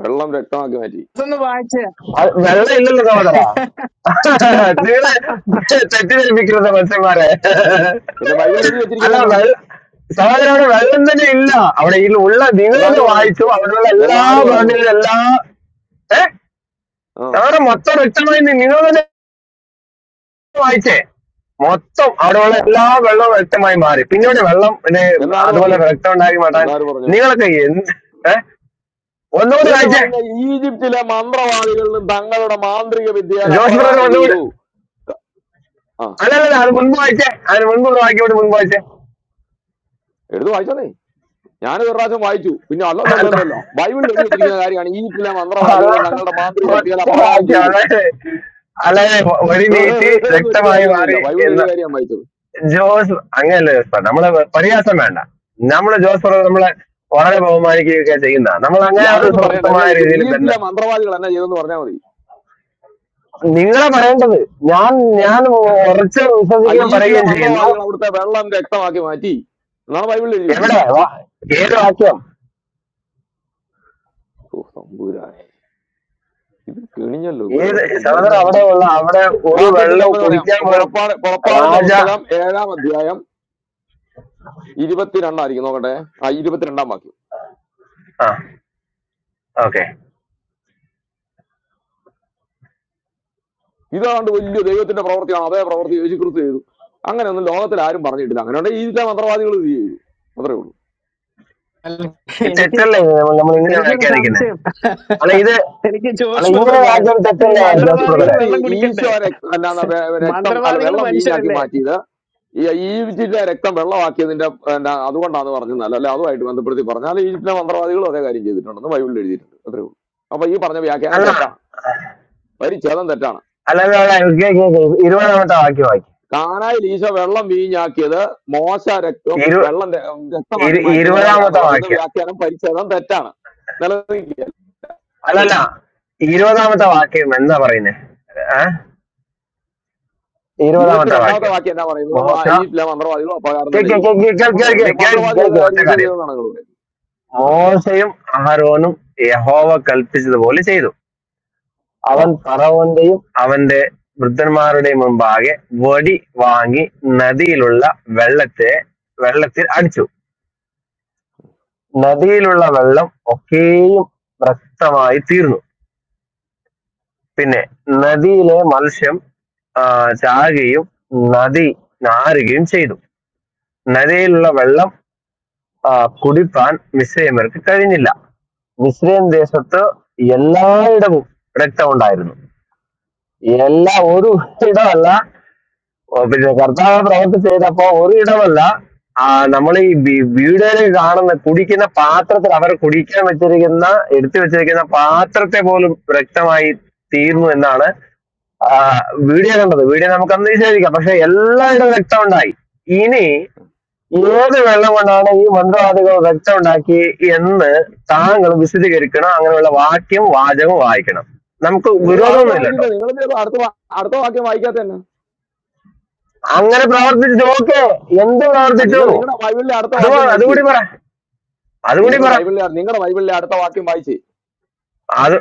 Speaker 4: വെള്ളം രക്തമാക്കി മാറ്റി
Speaker 6: അതൊന്ന് വായിച്ച്
Speaker 8: അത് വെള്ളം ഇല്ലല്ലോ സഹോദര നിങ്ങള് തെറ്റിദ്ധരിപ്പിക്കുന്നത് മത്സ്യന്മാരെ
Speaker 4: പിന്നെ ബൈബിളിൽ എഴുതി
Speaker 8: അല്ല
Speaker 4: വെച്ചിരിക്കുന്നത് എന്നാ
Speaker 8: വെള്ള സഹോദര അവിടെ വെള്ളം തന്നെ ഇല്ല അവിടെ ഈ ഉള്ള നിങ്ങളത്
Speaker 4: എന്നാര് പറഞ്ഞു
Speaker 8: വായിച്ചു അവിടെയുള്ള എല്ലാ
Speaker 4: എന്നാര് പറഞ്ഞു
Speaker 8: ബ്രാൻഡിലും എല്ലാ ഏ
Speaker 4: ആ
Speaker 8: സഹോദര മൊത്തം വ്യക്തമായി നി- നിങ്ങൾ തന്നെ വായിച്ചേ മൊത്തം അവിടെയുള്ള എല്ലാ വെള്ളവും വ്യക്തമായി മാറി പിന്നെ ഇവിടെ വെള്ളം പിന്നെ
Speaker 4: എന്നാര്
Speaker 8: അതുപോലെ
Speaker 4: പറഞ്ഞു
Speaker 8: രക്തം ഉണ്ടാക്കി മാറ്റാൻ
Speaker 4: എന്നാര് പറഞ്ഞു
Speaker 8: നിങ്ങളൊക്കെ എന്ത് ഏ ഒന്നുകൂടി
Speaker 4: ഇതല്ലേ
Speaker 8: വായിച്ചേ
Speaker 4: പറയുന്ന ഈജിപ്തിലെ മന്ത്രവാദികളിലും തങ്ങളുടെ മാന്ത്രിക വിദ്യയാൽ
Speaker 8: ജോസ് ബ്രദർ
Speaker 4: അപ്രകാരം
Speaker 8: ഒന്നുകൂടി
Speaker 4: ചെയ്തു ആ
Speaker 8: അല്ലല്ല അത് മുൻപ് വായിച്ചേ അതിന് മുൻപുള്ള വാക്യം ഇവിടെ മുൻപ് വായിച്ചേ
Speaker 4: എടുത്ത് വായിച്ചോന്നേ ഞാൻ ഒരു പ്രാവശ്യം വായിച്ചു പിന്നെ അല്ലല്ലോ
Speaker 8: അല്ല
Speaker 4: അല്ലല്ലോ ബൈബിളിൽ എഴുതി വെച്ചിരിക്കുന്ന കാര്യമാണ് ഈജിപ്തിലെ
Speaker 8: അല്ല
Speaker 4: മന്ത്രവാദികളും തങ്ങളുടെ മാന്ത്രിക ശക്തികൾ
Speaker 8: ഒറ്റ
Speaker 4: അപ്രകാരം
Speaker 8: വാക്യം
Speaker 4: ചെയ്തു
Speaker 8: അതായത് അല്ലാതെ വഴി നീട്ടി
Speaker 4: എന്ന് വെച്ചിട്ട്
Speaker 8: രക്തമായി മാറി
Speaker 4: കാര്യമൊന്നുമില്ല ബൈബിൾ
Speaker 8: എന്ന്
Speaker 4: എഴുതിയ കാര്യം വായിച്ചത്
Speaker 8: ജോസ് അങ്ങനല്ല ജോസ് ബ്രദർ. നമ്മളെ പരിഹാസം വേണ്ട നമ്മളെ ജോസ് ബ്രദർ നമ്മളെ വളരെ ബഹുമാനിക്കുകയൊക്കെ ചെയ്യുന്ന നമ്മൾ
Speaker 4: ഈ
Speaker 8: അങ്ങനെ ഒരു
Speaker 4: അതൊന്നും പറയണ്ട ഇവിടെ
Speaker 8: സുഹൃത്തമായ രീതിയിൽ
Speaker 4: ഈജിപ്തിലെ
Speaker 8: ബന്ധം
Speaker 4: മന്ത്രവാദികൾ എന്നാ ചെയ്തെന്ന് പറഞ്ഞാൽ മതി
Speaker 8: നിങ്ങളെ പറയേണ്ടത് ഞാൻ ഞാൻ ഉറച്ച്
Speaker 4: ആ
Speaker 8: വിശ്വസിക്കുകയും
Speaker 4: ഈജിപ്തിലെ
Speaker 8: പറയുകയും ചെയ്യുന്നു
Speaker 4: മന്ത്രവാദികൾ അവിടുത്തെ വെള്ളം രക്തമാക്കി മാറ്റി എന്നാണ് ബൈബിളിൽ എഴുതി
Speaker 8: എവിടെ
Speaker 4: വെച്ചിരിക്കുന്നത്
Speaker 8: വാ- ഏത് വാക്യം
Speaker 4: ഓ തമ്പുരാനെ ഇത് കിണിഞ്ഞല്ലോ
Speaker 8: ഏത്
Speaker 4: ഇവരോടൊക്കെ
Speaker 8: സഹോദര
Speaker 4: സംസാരിക്കണേ
Speaker 8: അവിടെ ഉള്ള അവിടെ ഒരു
Speaker 4: വാക്യത്തിന്റെ
Speaker 8: വെള്ളം
Speaker 4: അമ്മ പറയാം
Speaker 8: കുടിക്കാൻ പോലും
Speaker 4: പുറപ്പാട് പുറപ്പാടിന്റെ
Speaker 8: രാജ
Speaker 4: പുസ്തകം ഏഴാം അധ്യായം ഇരുപത്തിരണ്ടായിരിക്കും നോക്കട്ടെ ആ ഇരുപത്തിരണ്ടാം വാക്യം
Speaker 8: ആ ഓക്കെ
Speaker 4: ഇതാണ്ട് വലിയ ദൈവത്തിന്റെ പ്രവൃത്തിയാണ് അതേ പ്രവൃത്തി യേശുക്രിസ്തു ചെയ്തു അങ്ങനെയൊന്നും ലോകത്തിൽ ആരും പറഞ്ഞിട്ടില്ല അങ്ങനെയുണ്ടെങ്കിൽ ഈജിപ്തിലെ മന്ത്രവാദികൾ ഇത് ചെയ്തു അത്രേ ഉള്ളൂ
Speaker 6: അല്ല,
Speaker 8: ഇത്
Speaker 6: എനിക്ക്
Speaker 8: തെറ്റല്ലേ നമ്മൾ ഇങ്ങനെ
Speaker 6: എനിക്കൊരു
Speaker 8: വ്യാഖ്യാനിക്കുന്നേ
Speaker 6: സംശയം
Speaker 8: അല്ല ഇത്
Speaker 6: എനിക്ക്
Speaker 8: അല്ല
Speaker 6: ജോഷ് ബ്രദർ
Speaker 8: ഇങ്ങനെ
Speaker 6: പറയാം
Speaker 8: വാക്യം
Speaker 6: ഇപ്പൊ ഈ
Speaker 8: തെറ്റല്ലേ
Speaker 4: തെറ്റ്
Speaker 8: ജോസ്
Speaker 6: മന്ത്രവാദികൾ
Speaker 8: ബ്രദറെ
Speaker 4: തെറ്റ്
Speaker 6: വെള്ളം കുടിക്കണ്ടേ
Speaker 4: ഈശോ രക്ത- എന്നാ വെ- രക്തം അല്ല
Speaker 6: മന്ത്രവാദികൾ
Speaker 4: വെള്ളം വീഞ്ഞാക്കി
Speaker 6: മനുഷ്യരല്ലേ
Speaker 4: മാറ്റിയത് ഈ ഈജിപ്തിലെ രക്തം വെള്ളമാക്കിയതിന്റെ എന്നാ അതുകൊണ്ടാന്ന് പറഞ്ഞത് അല്ല അല്ലെ അതുമായിട്ട് ബന്ധപ്പെടുത്തി പറഞ്ഞാൽ ഈജിപ്തിലെ മന്ത്രവാദികളും അതേ കാര്യം ചെയ്തിട്ടുണ്ടെന്ന് ബൈബിളിൽ എഴുതിയിട്ടുണ്ട് അത്രേ ഉള്ളൂ അപ്പൊ ഈ പറഞ്ഞ വ്യാഖ്യാനം
Speaker 8: അല്ല
Speaker 4: തെറ്റാണ് പരിച്ഛേദം തെറ്റാണ്
Speaker 8: അല്ല അല്ല, അല്ല, കേ- കേ- കേ, ഇരുപതാമത്തെ വാക്യം വാക്യം
Speaker 4: കാനായിൽ ഈശോ വെള്ളം വീഞ്ഞാക്കിയത് മോശ രക്തം
Speaker 8: ഇരു
Speaker 4: വെള്ളം ര- രക്തമാക്കി
Speaker 8: ഇരു-
Speaker 4: മാറ്റിയതുപോലെയാന്ന്
Speaker 8: ഇരുപതാമത്തെ
Speaker 4: പറയുന്ന
Speaker 8: വാക്യം
Speaker 4: വ്യാഖ്യാനം പരിച്ഛേദം തെറ്റാണ് നിലനിൽക്കുക
Speaker 8: അല്ലല്ല ഇരുപതാമത്തെ വാക്യം എന്താ പറയുന്നേ ഏ ഇരുപതാമത്തെ
Speaker 4: ഇരുപത്തിരണ്ടാമത്തെ
Speaker 8: വാക്യം
Speaker 4: വാക്യം എന്നാ പറയുന്നത്
Speaker 8: മോശ
Speaker 4: മാ- ഈ ചില മന്ത്രവാദികളും അപകാരം
Speaker 8: കേ-
Speaker 4: തന്നെ
Speaker 8: കേ-
Speaker 4: ചെയ്തു
Speaker 8: കേ- കേ- കേൾ-
Speaker 4: അപ്പൊ
Speaker 8: കേൾ-
Speaker 4: അങ്ങനെ
Speaker 8: കേൾ- കേൾ-
Speaker 4: മന്ത്രവാദി ചെയ്ത
Speaker 8: കേൾക്കേ ഒറ്റ
Speaker 4: കാര്യം ഈശോ
Speaker 8: കാര്യം
Speaker 4: ചെയ്തെന്നാണ് നിങ്ങൾ ആ
Speaker 8: മോശയും അഹരോനും യഹോവ കൽപ്പിച്ചതുപോലെ ചെയ്തു
Speaker 4: ആ
Speaker 8: അവൻ പറവന്റെയും അവന്റെ വൃദ്ധന്മാരുടെയും മുമ്പാകെ വടി വാങ്ങി നദിയിലുള്ള വെള്ളത്തെ വെള്ളത്തിൽ അടിച്ചു നദിയിലുള്ള വെള്ളം ഒക്കെയും രക്തമായി തീർന്നു പിന്നെ നദിയിലെ മത്സ്യം ആ, ചാകുകയും നദി നാരുകയും ചെയ്തു നദിയിലുള്ള വെള്ളം ആ, കുടിപ്പാൻ മിസ്രൈമ്യർക്ക് കഴിഞ്ഞില്ല മിസ്രൈം ദേശത്ത് എല്ലായിടവും രക്തം ഉണ്ടായിരുന്നു എല്ലാ ഒരു ഇടമല്ല ഓ, പിന്നെ കർത്താവ് പ്രവർത്തി ചെയ്തപ്പോ ഒരു ഇടമല്ല ആ, നമ്മൾ ഈ വി- വീടുകളിൽ കാണുന്ന കുടിക്കുന്ന പാത്രത്തിൽ അവർ കുടിക്കാൻ വെച്ചിരിക്കുന്ന എടുത്തു വെച്ചിരിക്കുന്ന പാത്രത്തെ പോലും രക്തമായി തീർന്നു എന്നാണ് ആ, വീഡിയോ കണ്ടത് വീഡിയോ നമുക്ക് അന്ന് വിശേഷിക്കാം പക്ഷെ എല്ലായിടവും രക്തം ഉണ്ടായി ഇനി ഏത് വെള്ളം കൊണ്ടാണ് ഈ മന്ത്രവാദികൾ രക്തം ഉണ്ടാക്കി എന്ന് താങ്കൾ വിശദീകരിക്കണം അങ്ങനെയുള്ള വാക്യം വാചകം വായിക്കണം നമുക്ക്
Speaker 4: നിങ്ങൾ വാഴോട്
Speaker 8: വിരോധമൊന്നുമില്ല കേട്ടോ
Speaker 4: വായിക്കുന്നത് നിങ്ങൾ അടുത്ത വാ- അടുത്ത വാക്യം വായിക്കാത്ത തന്നെ
Speaker 8: അങ്ങനെ പ്രവർത്തിച്ചു ഓക്കെ എന്ത്
Speaker 4: ആ
Speaker 8: പ്രവർത്തിച്ചു
Speaker 4: നിങ്ങൾ നിങ്ങളുടെ ബൈബിളിലെ അടുത്ത
Speaker 8: അത്
Speaker 4: വാക്യം
Speaker 8: വാ-
Speaker 4: വായിച്ചേ
Speaker 8: അതുകൂടി പറ അതുകൂടി
Speaker 4: നിങ്ങൾ
Speaker 8: പറ
Speaker 4: ബൈബിളിലെ നിങ്ങളുടെ ബൈബിളിലെ അടുത്ത വാക്യം വായിച്ചേ
Speaker 8: അത്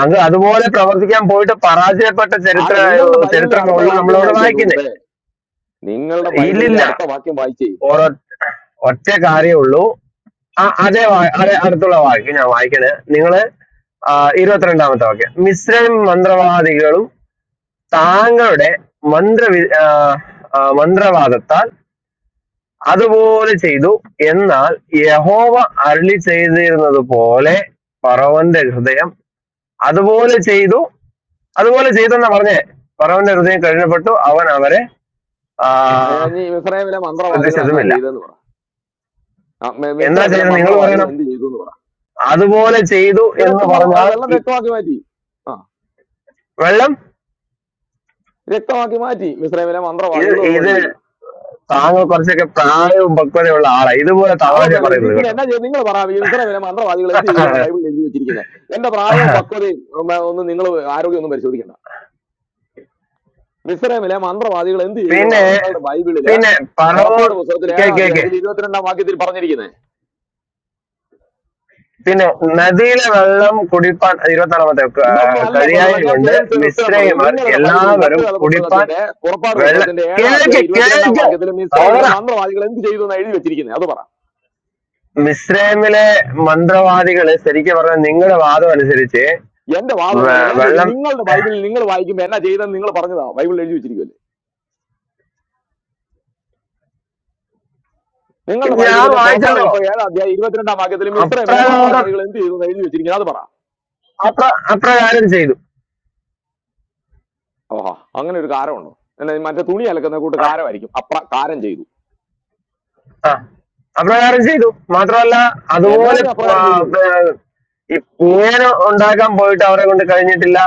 Speaker 8: അത് അതുപോലെ പ്രവർത്തിക്കാൻ പോയിട്ട് പരാജയപ്പെട്ട ചരിത്ര
Speaker 4: അല്ല നിങ്ങളുടെ ബൈബിളിലെ അടുത്ത
Speaker 8: ചരിത്രമുള്ളൂ
Speaker 4: വാക്യം
Speaker 8: നമ്മളവിടെ
Speaker 4: വായിച്ച
Speaker 8: വായിക്കുന്നേ
Speaker 4: സുഹൃത്തെ നിങ്ങളുടെ ബൈബിളിലെ
Speaker 8: ഇല്ലില്ല
Speaker 4: അടുത്ത വാക്യം വായിച്ചേ
Speaker 8: ഒര- ഒറ്റ കാര്യമേ ഉള്ളൂ ആ അതേ വാ- അതേ അടുത്തുള്ള വാക്യം ഞാൻ വായിക്കണേ നിങ്ങള് ആ, ഇരുപത്തിരണ്ടാമത്തെ വാക്യം മിശ്രം മന്ത്രവാദികളും താങ്കളുടെ മന്ത്രവി ആ, ആ, മന്ത്രവാദത്താൽ അതുപോലെ ചെയ്തു എന്നാൽ യഹോവ അരുളി ചെയ്തിരുന്നത് പോലെ ഫറവന്റെ ഹൃദയം അതുപോലെ ചെയ്തു അതുപോലെ ചെയ്തെന്നാ പറഞ്ഞേ ഫറവന്റെ ഹൃദയം കഴിഞ്ഞപ്പെട്ടു അവൻ അവരെ ആ,
Speaker 4: ആ, ഇനി ഇസ്രായേലിലെ മന്ത്രവാദികൾ എന്നാ
Speaker 8: ശ്രദ്ധിച്ചതുമില്ല
Speaker 4: ചെയ്തെന്ന് പറ ആ, മി-
Speaker 8: എന്നാ
Speaker 4: മിസ്രൈമിലെ
Speaker 8: ചെയ്തത് നിങ്ങൾ
Speaker 4: മന്ത്രവാദികൾ
Speaker 8: പറയണം
Speaker 4: എന്ത് ചെയ്തു എന്ന് പറ
Speaker 8: അതുപോലെ ചെയ്തു
Speaker 4: ഇത്
Speaker 8: എന്ന്
Speaker 4: രക്തമുള്ള അല്ല,
Speaker 8: പറഞ്ഞാൽ
Speaker 4: വെള്ളം
Speaker 8: ഈ-
Speaker 4: രക്തമാക്കി മാറ്റി ആ
Speaker 8: വെള്ളം
Speaker 4: രക്തമാക്കി മാറ്റി മിസ്രൈമിലെ
Speaker 8: ഇത്
Speaker 4: മന്ത്രവാദികളും അതുപോലെ
Speaker 8: ഇത്
Speaker 4: ചെയ്തു
Speaker 8: താങ്കൾ കുറച്ചൊക്കെ പ്രായവും പക്വതയുള്ള ആളാ ഇതുപോലെ തമാശ
Speaker 4: അതൊന്നുമല്ല ഇത്
Speaker 8: പറയുന്നത്
Speaker 4: പിന്നെ
Speaker 8: കേട്ടോ
Speaker 4: എന്നാ ചെയ്തു നിങ്ങൾ പറയാം മിസ്രൈമിലെ മന്ത്രവാദികൾ എന്ത് ചെയ്തു എന്ന് ബൈബിളിൽ എഴുതി വെച്ചിരിക്കുന്നത് എന്റെ പ്രായവും പക്വതയും ഉം, ഒന്നും നിങ്ങൾ ആരോഗ്യം ഒന്നും പരിശോധിക്കണം മിസ്രൈമിലെ മന്ത്രവാദികൾ എന്ത് ചെയ്തു
Speaker 8: പിന്നെ
Speaker 4: എന്നാണ് നിങ്ങളുടെ ബൈബിളില്
Speaker 8: പിന്നെ പണവും
Speaker 4: പുറപ്പാട് പുസ്തകത്തിൽ
Speaker 8: കേ
Speaker 4: ഏഴാം
Speaker 8: കേക്ക്
Speaker 4: അധ്യായത്തിൽ ഇരുപത്തിരണ്ടാം വാക്യത്തിൽ പറഞ്ഞിരിക്കുന്നത്
Speaker 8: പിന്നെ നദിയിലെ വെള്ളം കുടിപ്പാൻ ഇരുപത്താറാമത്തെ
Speaker 4: ഇതൊന്നും അല്ല
Speaker 8: കഴിയായ
Speaker 4: ബ്രദറെ ഞാൻ
Speaker 8: കൊണ്ട്
Speaker 4: ചോദിച്ചതിന് ഉത്തരം പറയൂ
Speaker 8: മിശ്രയമാർ
Speaker 4: നിങ്ങളുടെ ബൈബിളിൽ
Speaker 8: എല്ലാവരും
Speaker 4: സത്യവേദ
Speaker 8: കുടിപ്പാൻ
Speaker 4: പുസ്തകത്തിന്റെ പുറപ്പാട്
Speaker 8: വെള്ള
Speaker 4: പുസ്തകത്തിന്റെ ഏഴാം
Speaker 8: കേക്ക്
Speaker 4: അധ്യായം ഇരുപത്തിരണ്ടാം
Speaker 8: കേക്ക്
Speaker 4: വാക്യത്തിൽ
Speaker 8: സൗറ
Speaker 4: മിസ്രൈമിലെ മന്ത്രവാദികൾ എന്ത് ചെയ്തു എന്ന് എഴുതി വെച്ചിരിക്കുന്നത് അത് പറ
Speaker 8: മിശ്രയമിലെ മന്ത്രവാദികള് ശരിക്കും പറഞ്ഞാൽ നിങ്ങളുടെ വാദം അനുസരിച്ച്
Speaker 4: എന്റെ വാദമൊന്നുമല്ല
Speaker 8: വെ-
Speaker 4: ഞാൻ ചോദിക്കും
Speaker 8: വെള്ളം
Speaker 4: നിങ്ങളുടെ ബൈബിളിൽ നിങ്ങൾ വായിക്കുമ്പോൾ എന്നാ ചെയ്തെന്ന് നിങ്ങൾ പറഞ്ഞതാ ബൈബിളിൽ എഴുതി വെച്ചിരിക്കുമല്ലേ നിങ്ങളുടെ
Speaker 8: ഞാൻ
Speaker 4: ബൈബിളിലെ പുറപ്പാട്
Speaker 8: വായിച്ചല്ലോ
Speaker 4: പുസ്തകം ഏഴാം അധ്യായം ഇരുപത്തിരണ്ടാം വാക്യത്തിൽ മിസ്രൈമിലെ
Speaker 8: അപ്രകാരം
Speaker 4: മന്ത്രവാദികൾ എന്ത് ചെയ്തു എന്ന് എഴുതി വെച്ചിരിക്കുന്നത് അത് പറ
Speaker 8: അപ്ര അപ്രകാരം ചെയ്തു
Speaker 4: ഓഹാ അങ്ങനെ ഒരു കാരമുണ്ടോ എന്നാ, മറ്റേ തുണി അലക്കുന്ന കൂട്ട് കാരമായിരിക്കും അപ്ര കാരം ചെയ്തു
Speaker 8: ആ അപ്രകാരം ചെയ്തു മാത്രമല്ല
Speaker 4: എന്നാ
Speaker 8: അതുപോലെ
Speaker 4: നീ
Speaker 8: ആ,
Speaker 4: അപ്രകാരം ചെയ്തു
Speaker 8: ഏർ, ഈ ഇങ്ങനെ ഉണ്ടാക്കാൻ പോയിട്ട് അവരെ കൊണ്ട് കഴിഞ്ഞിട്ടില്ല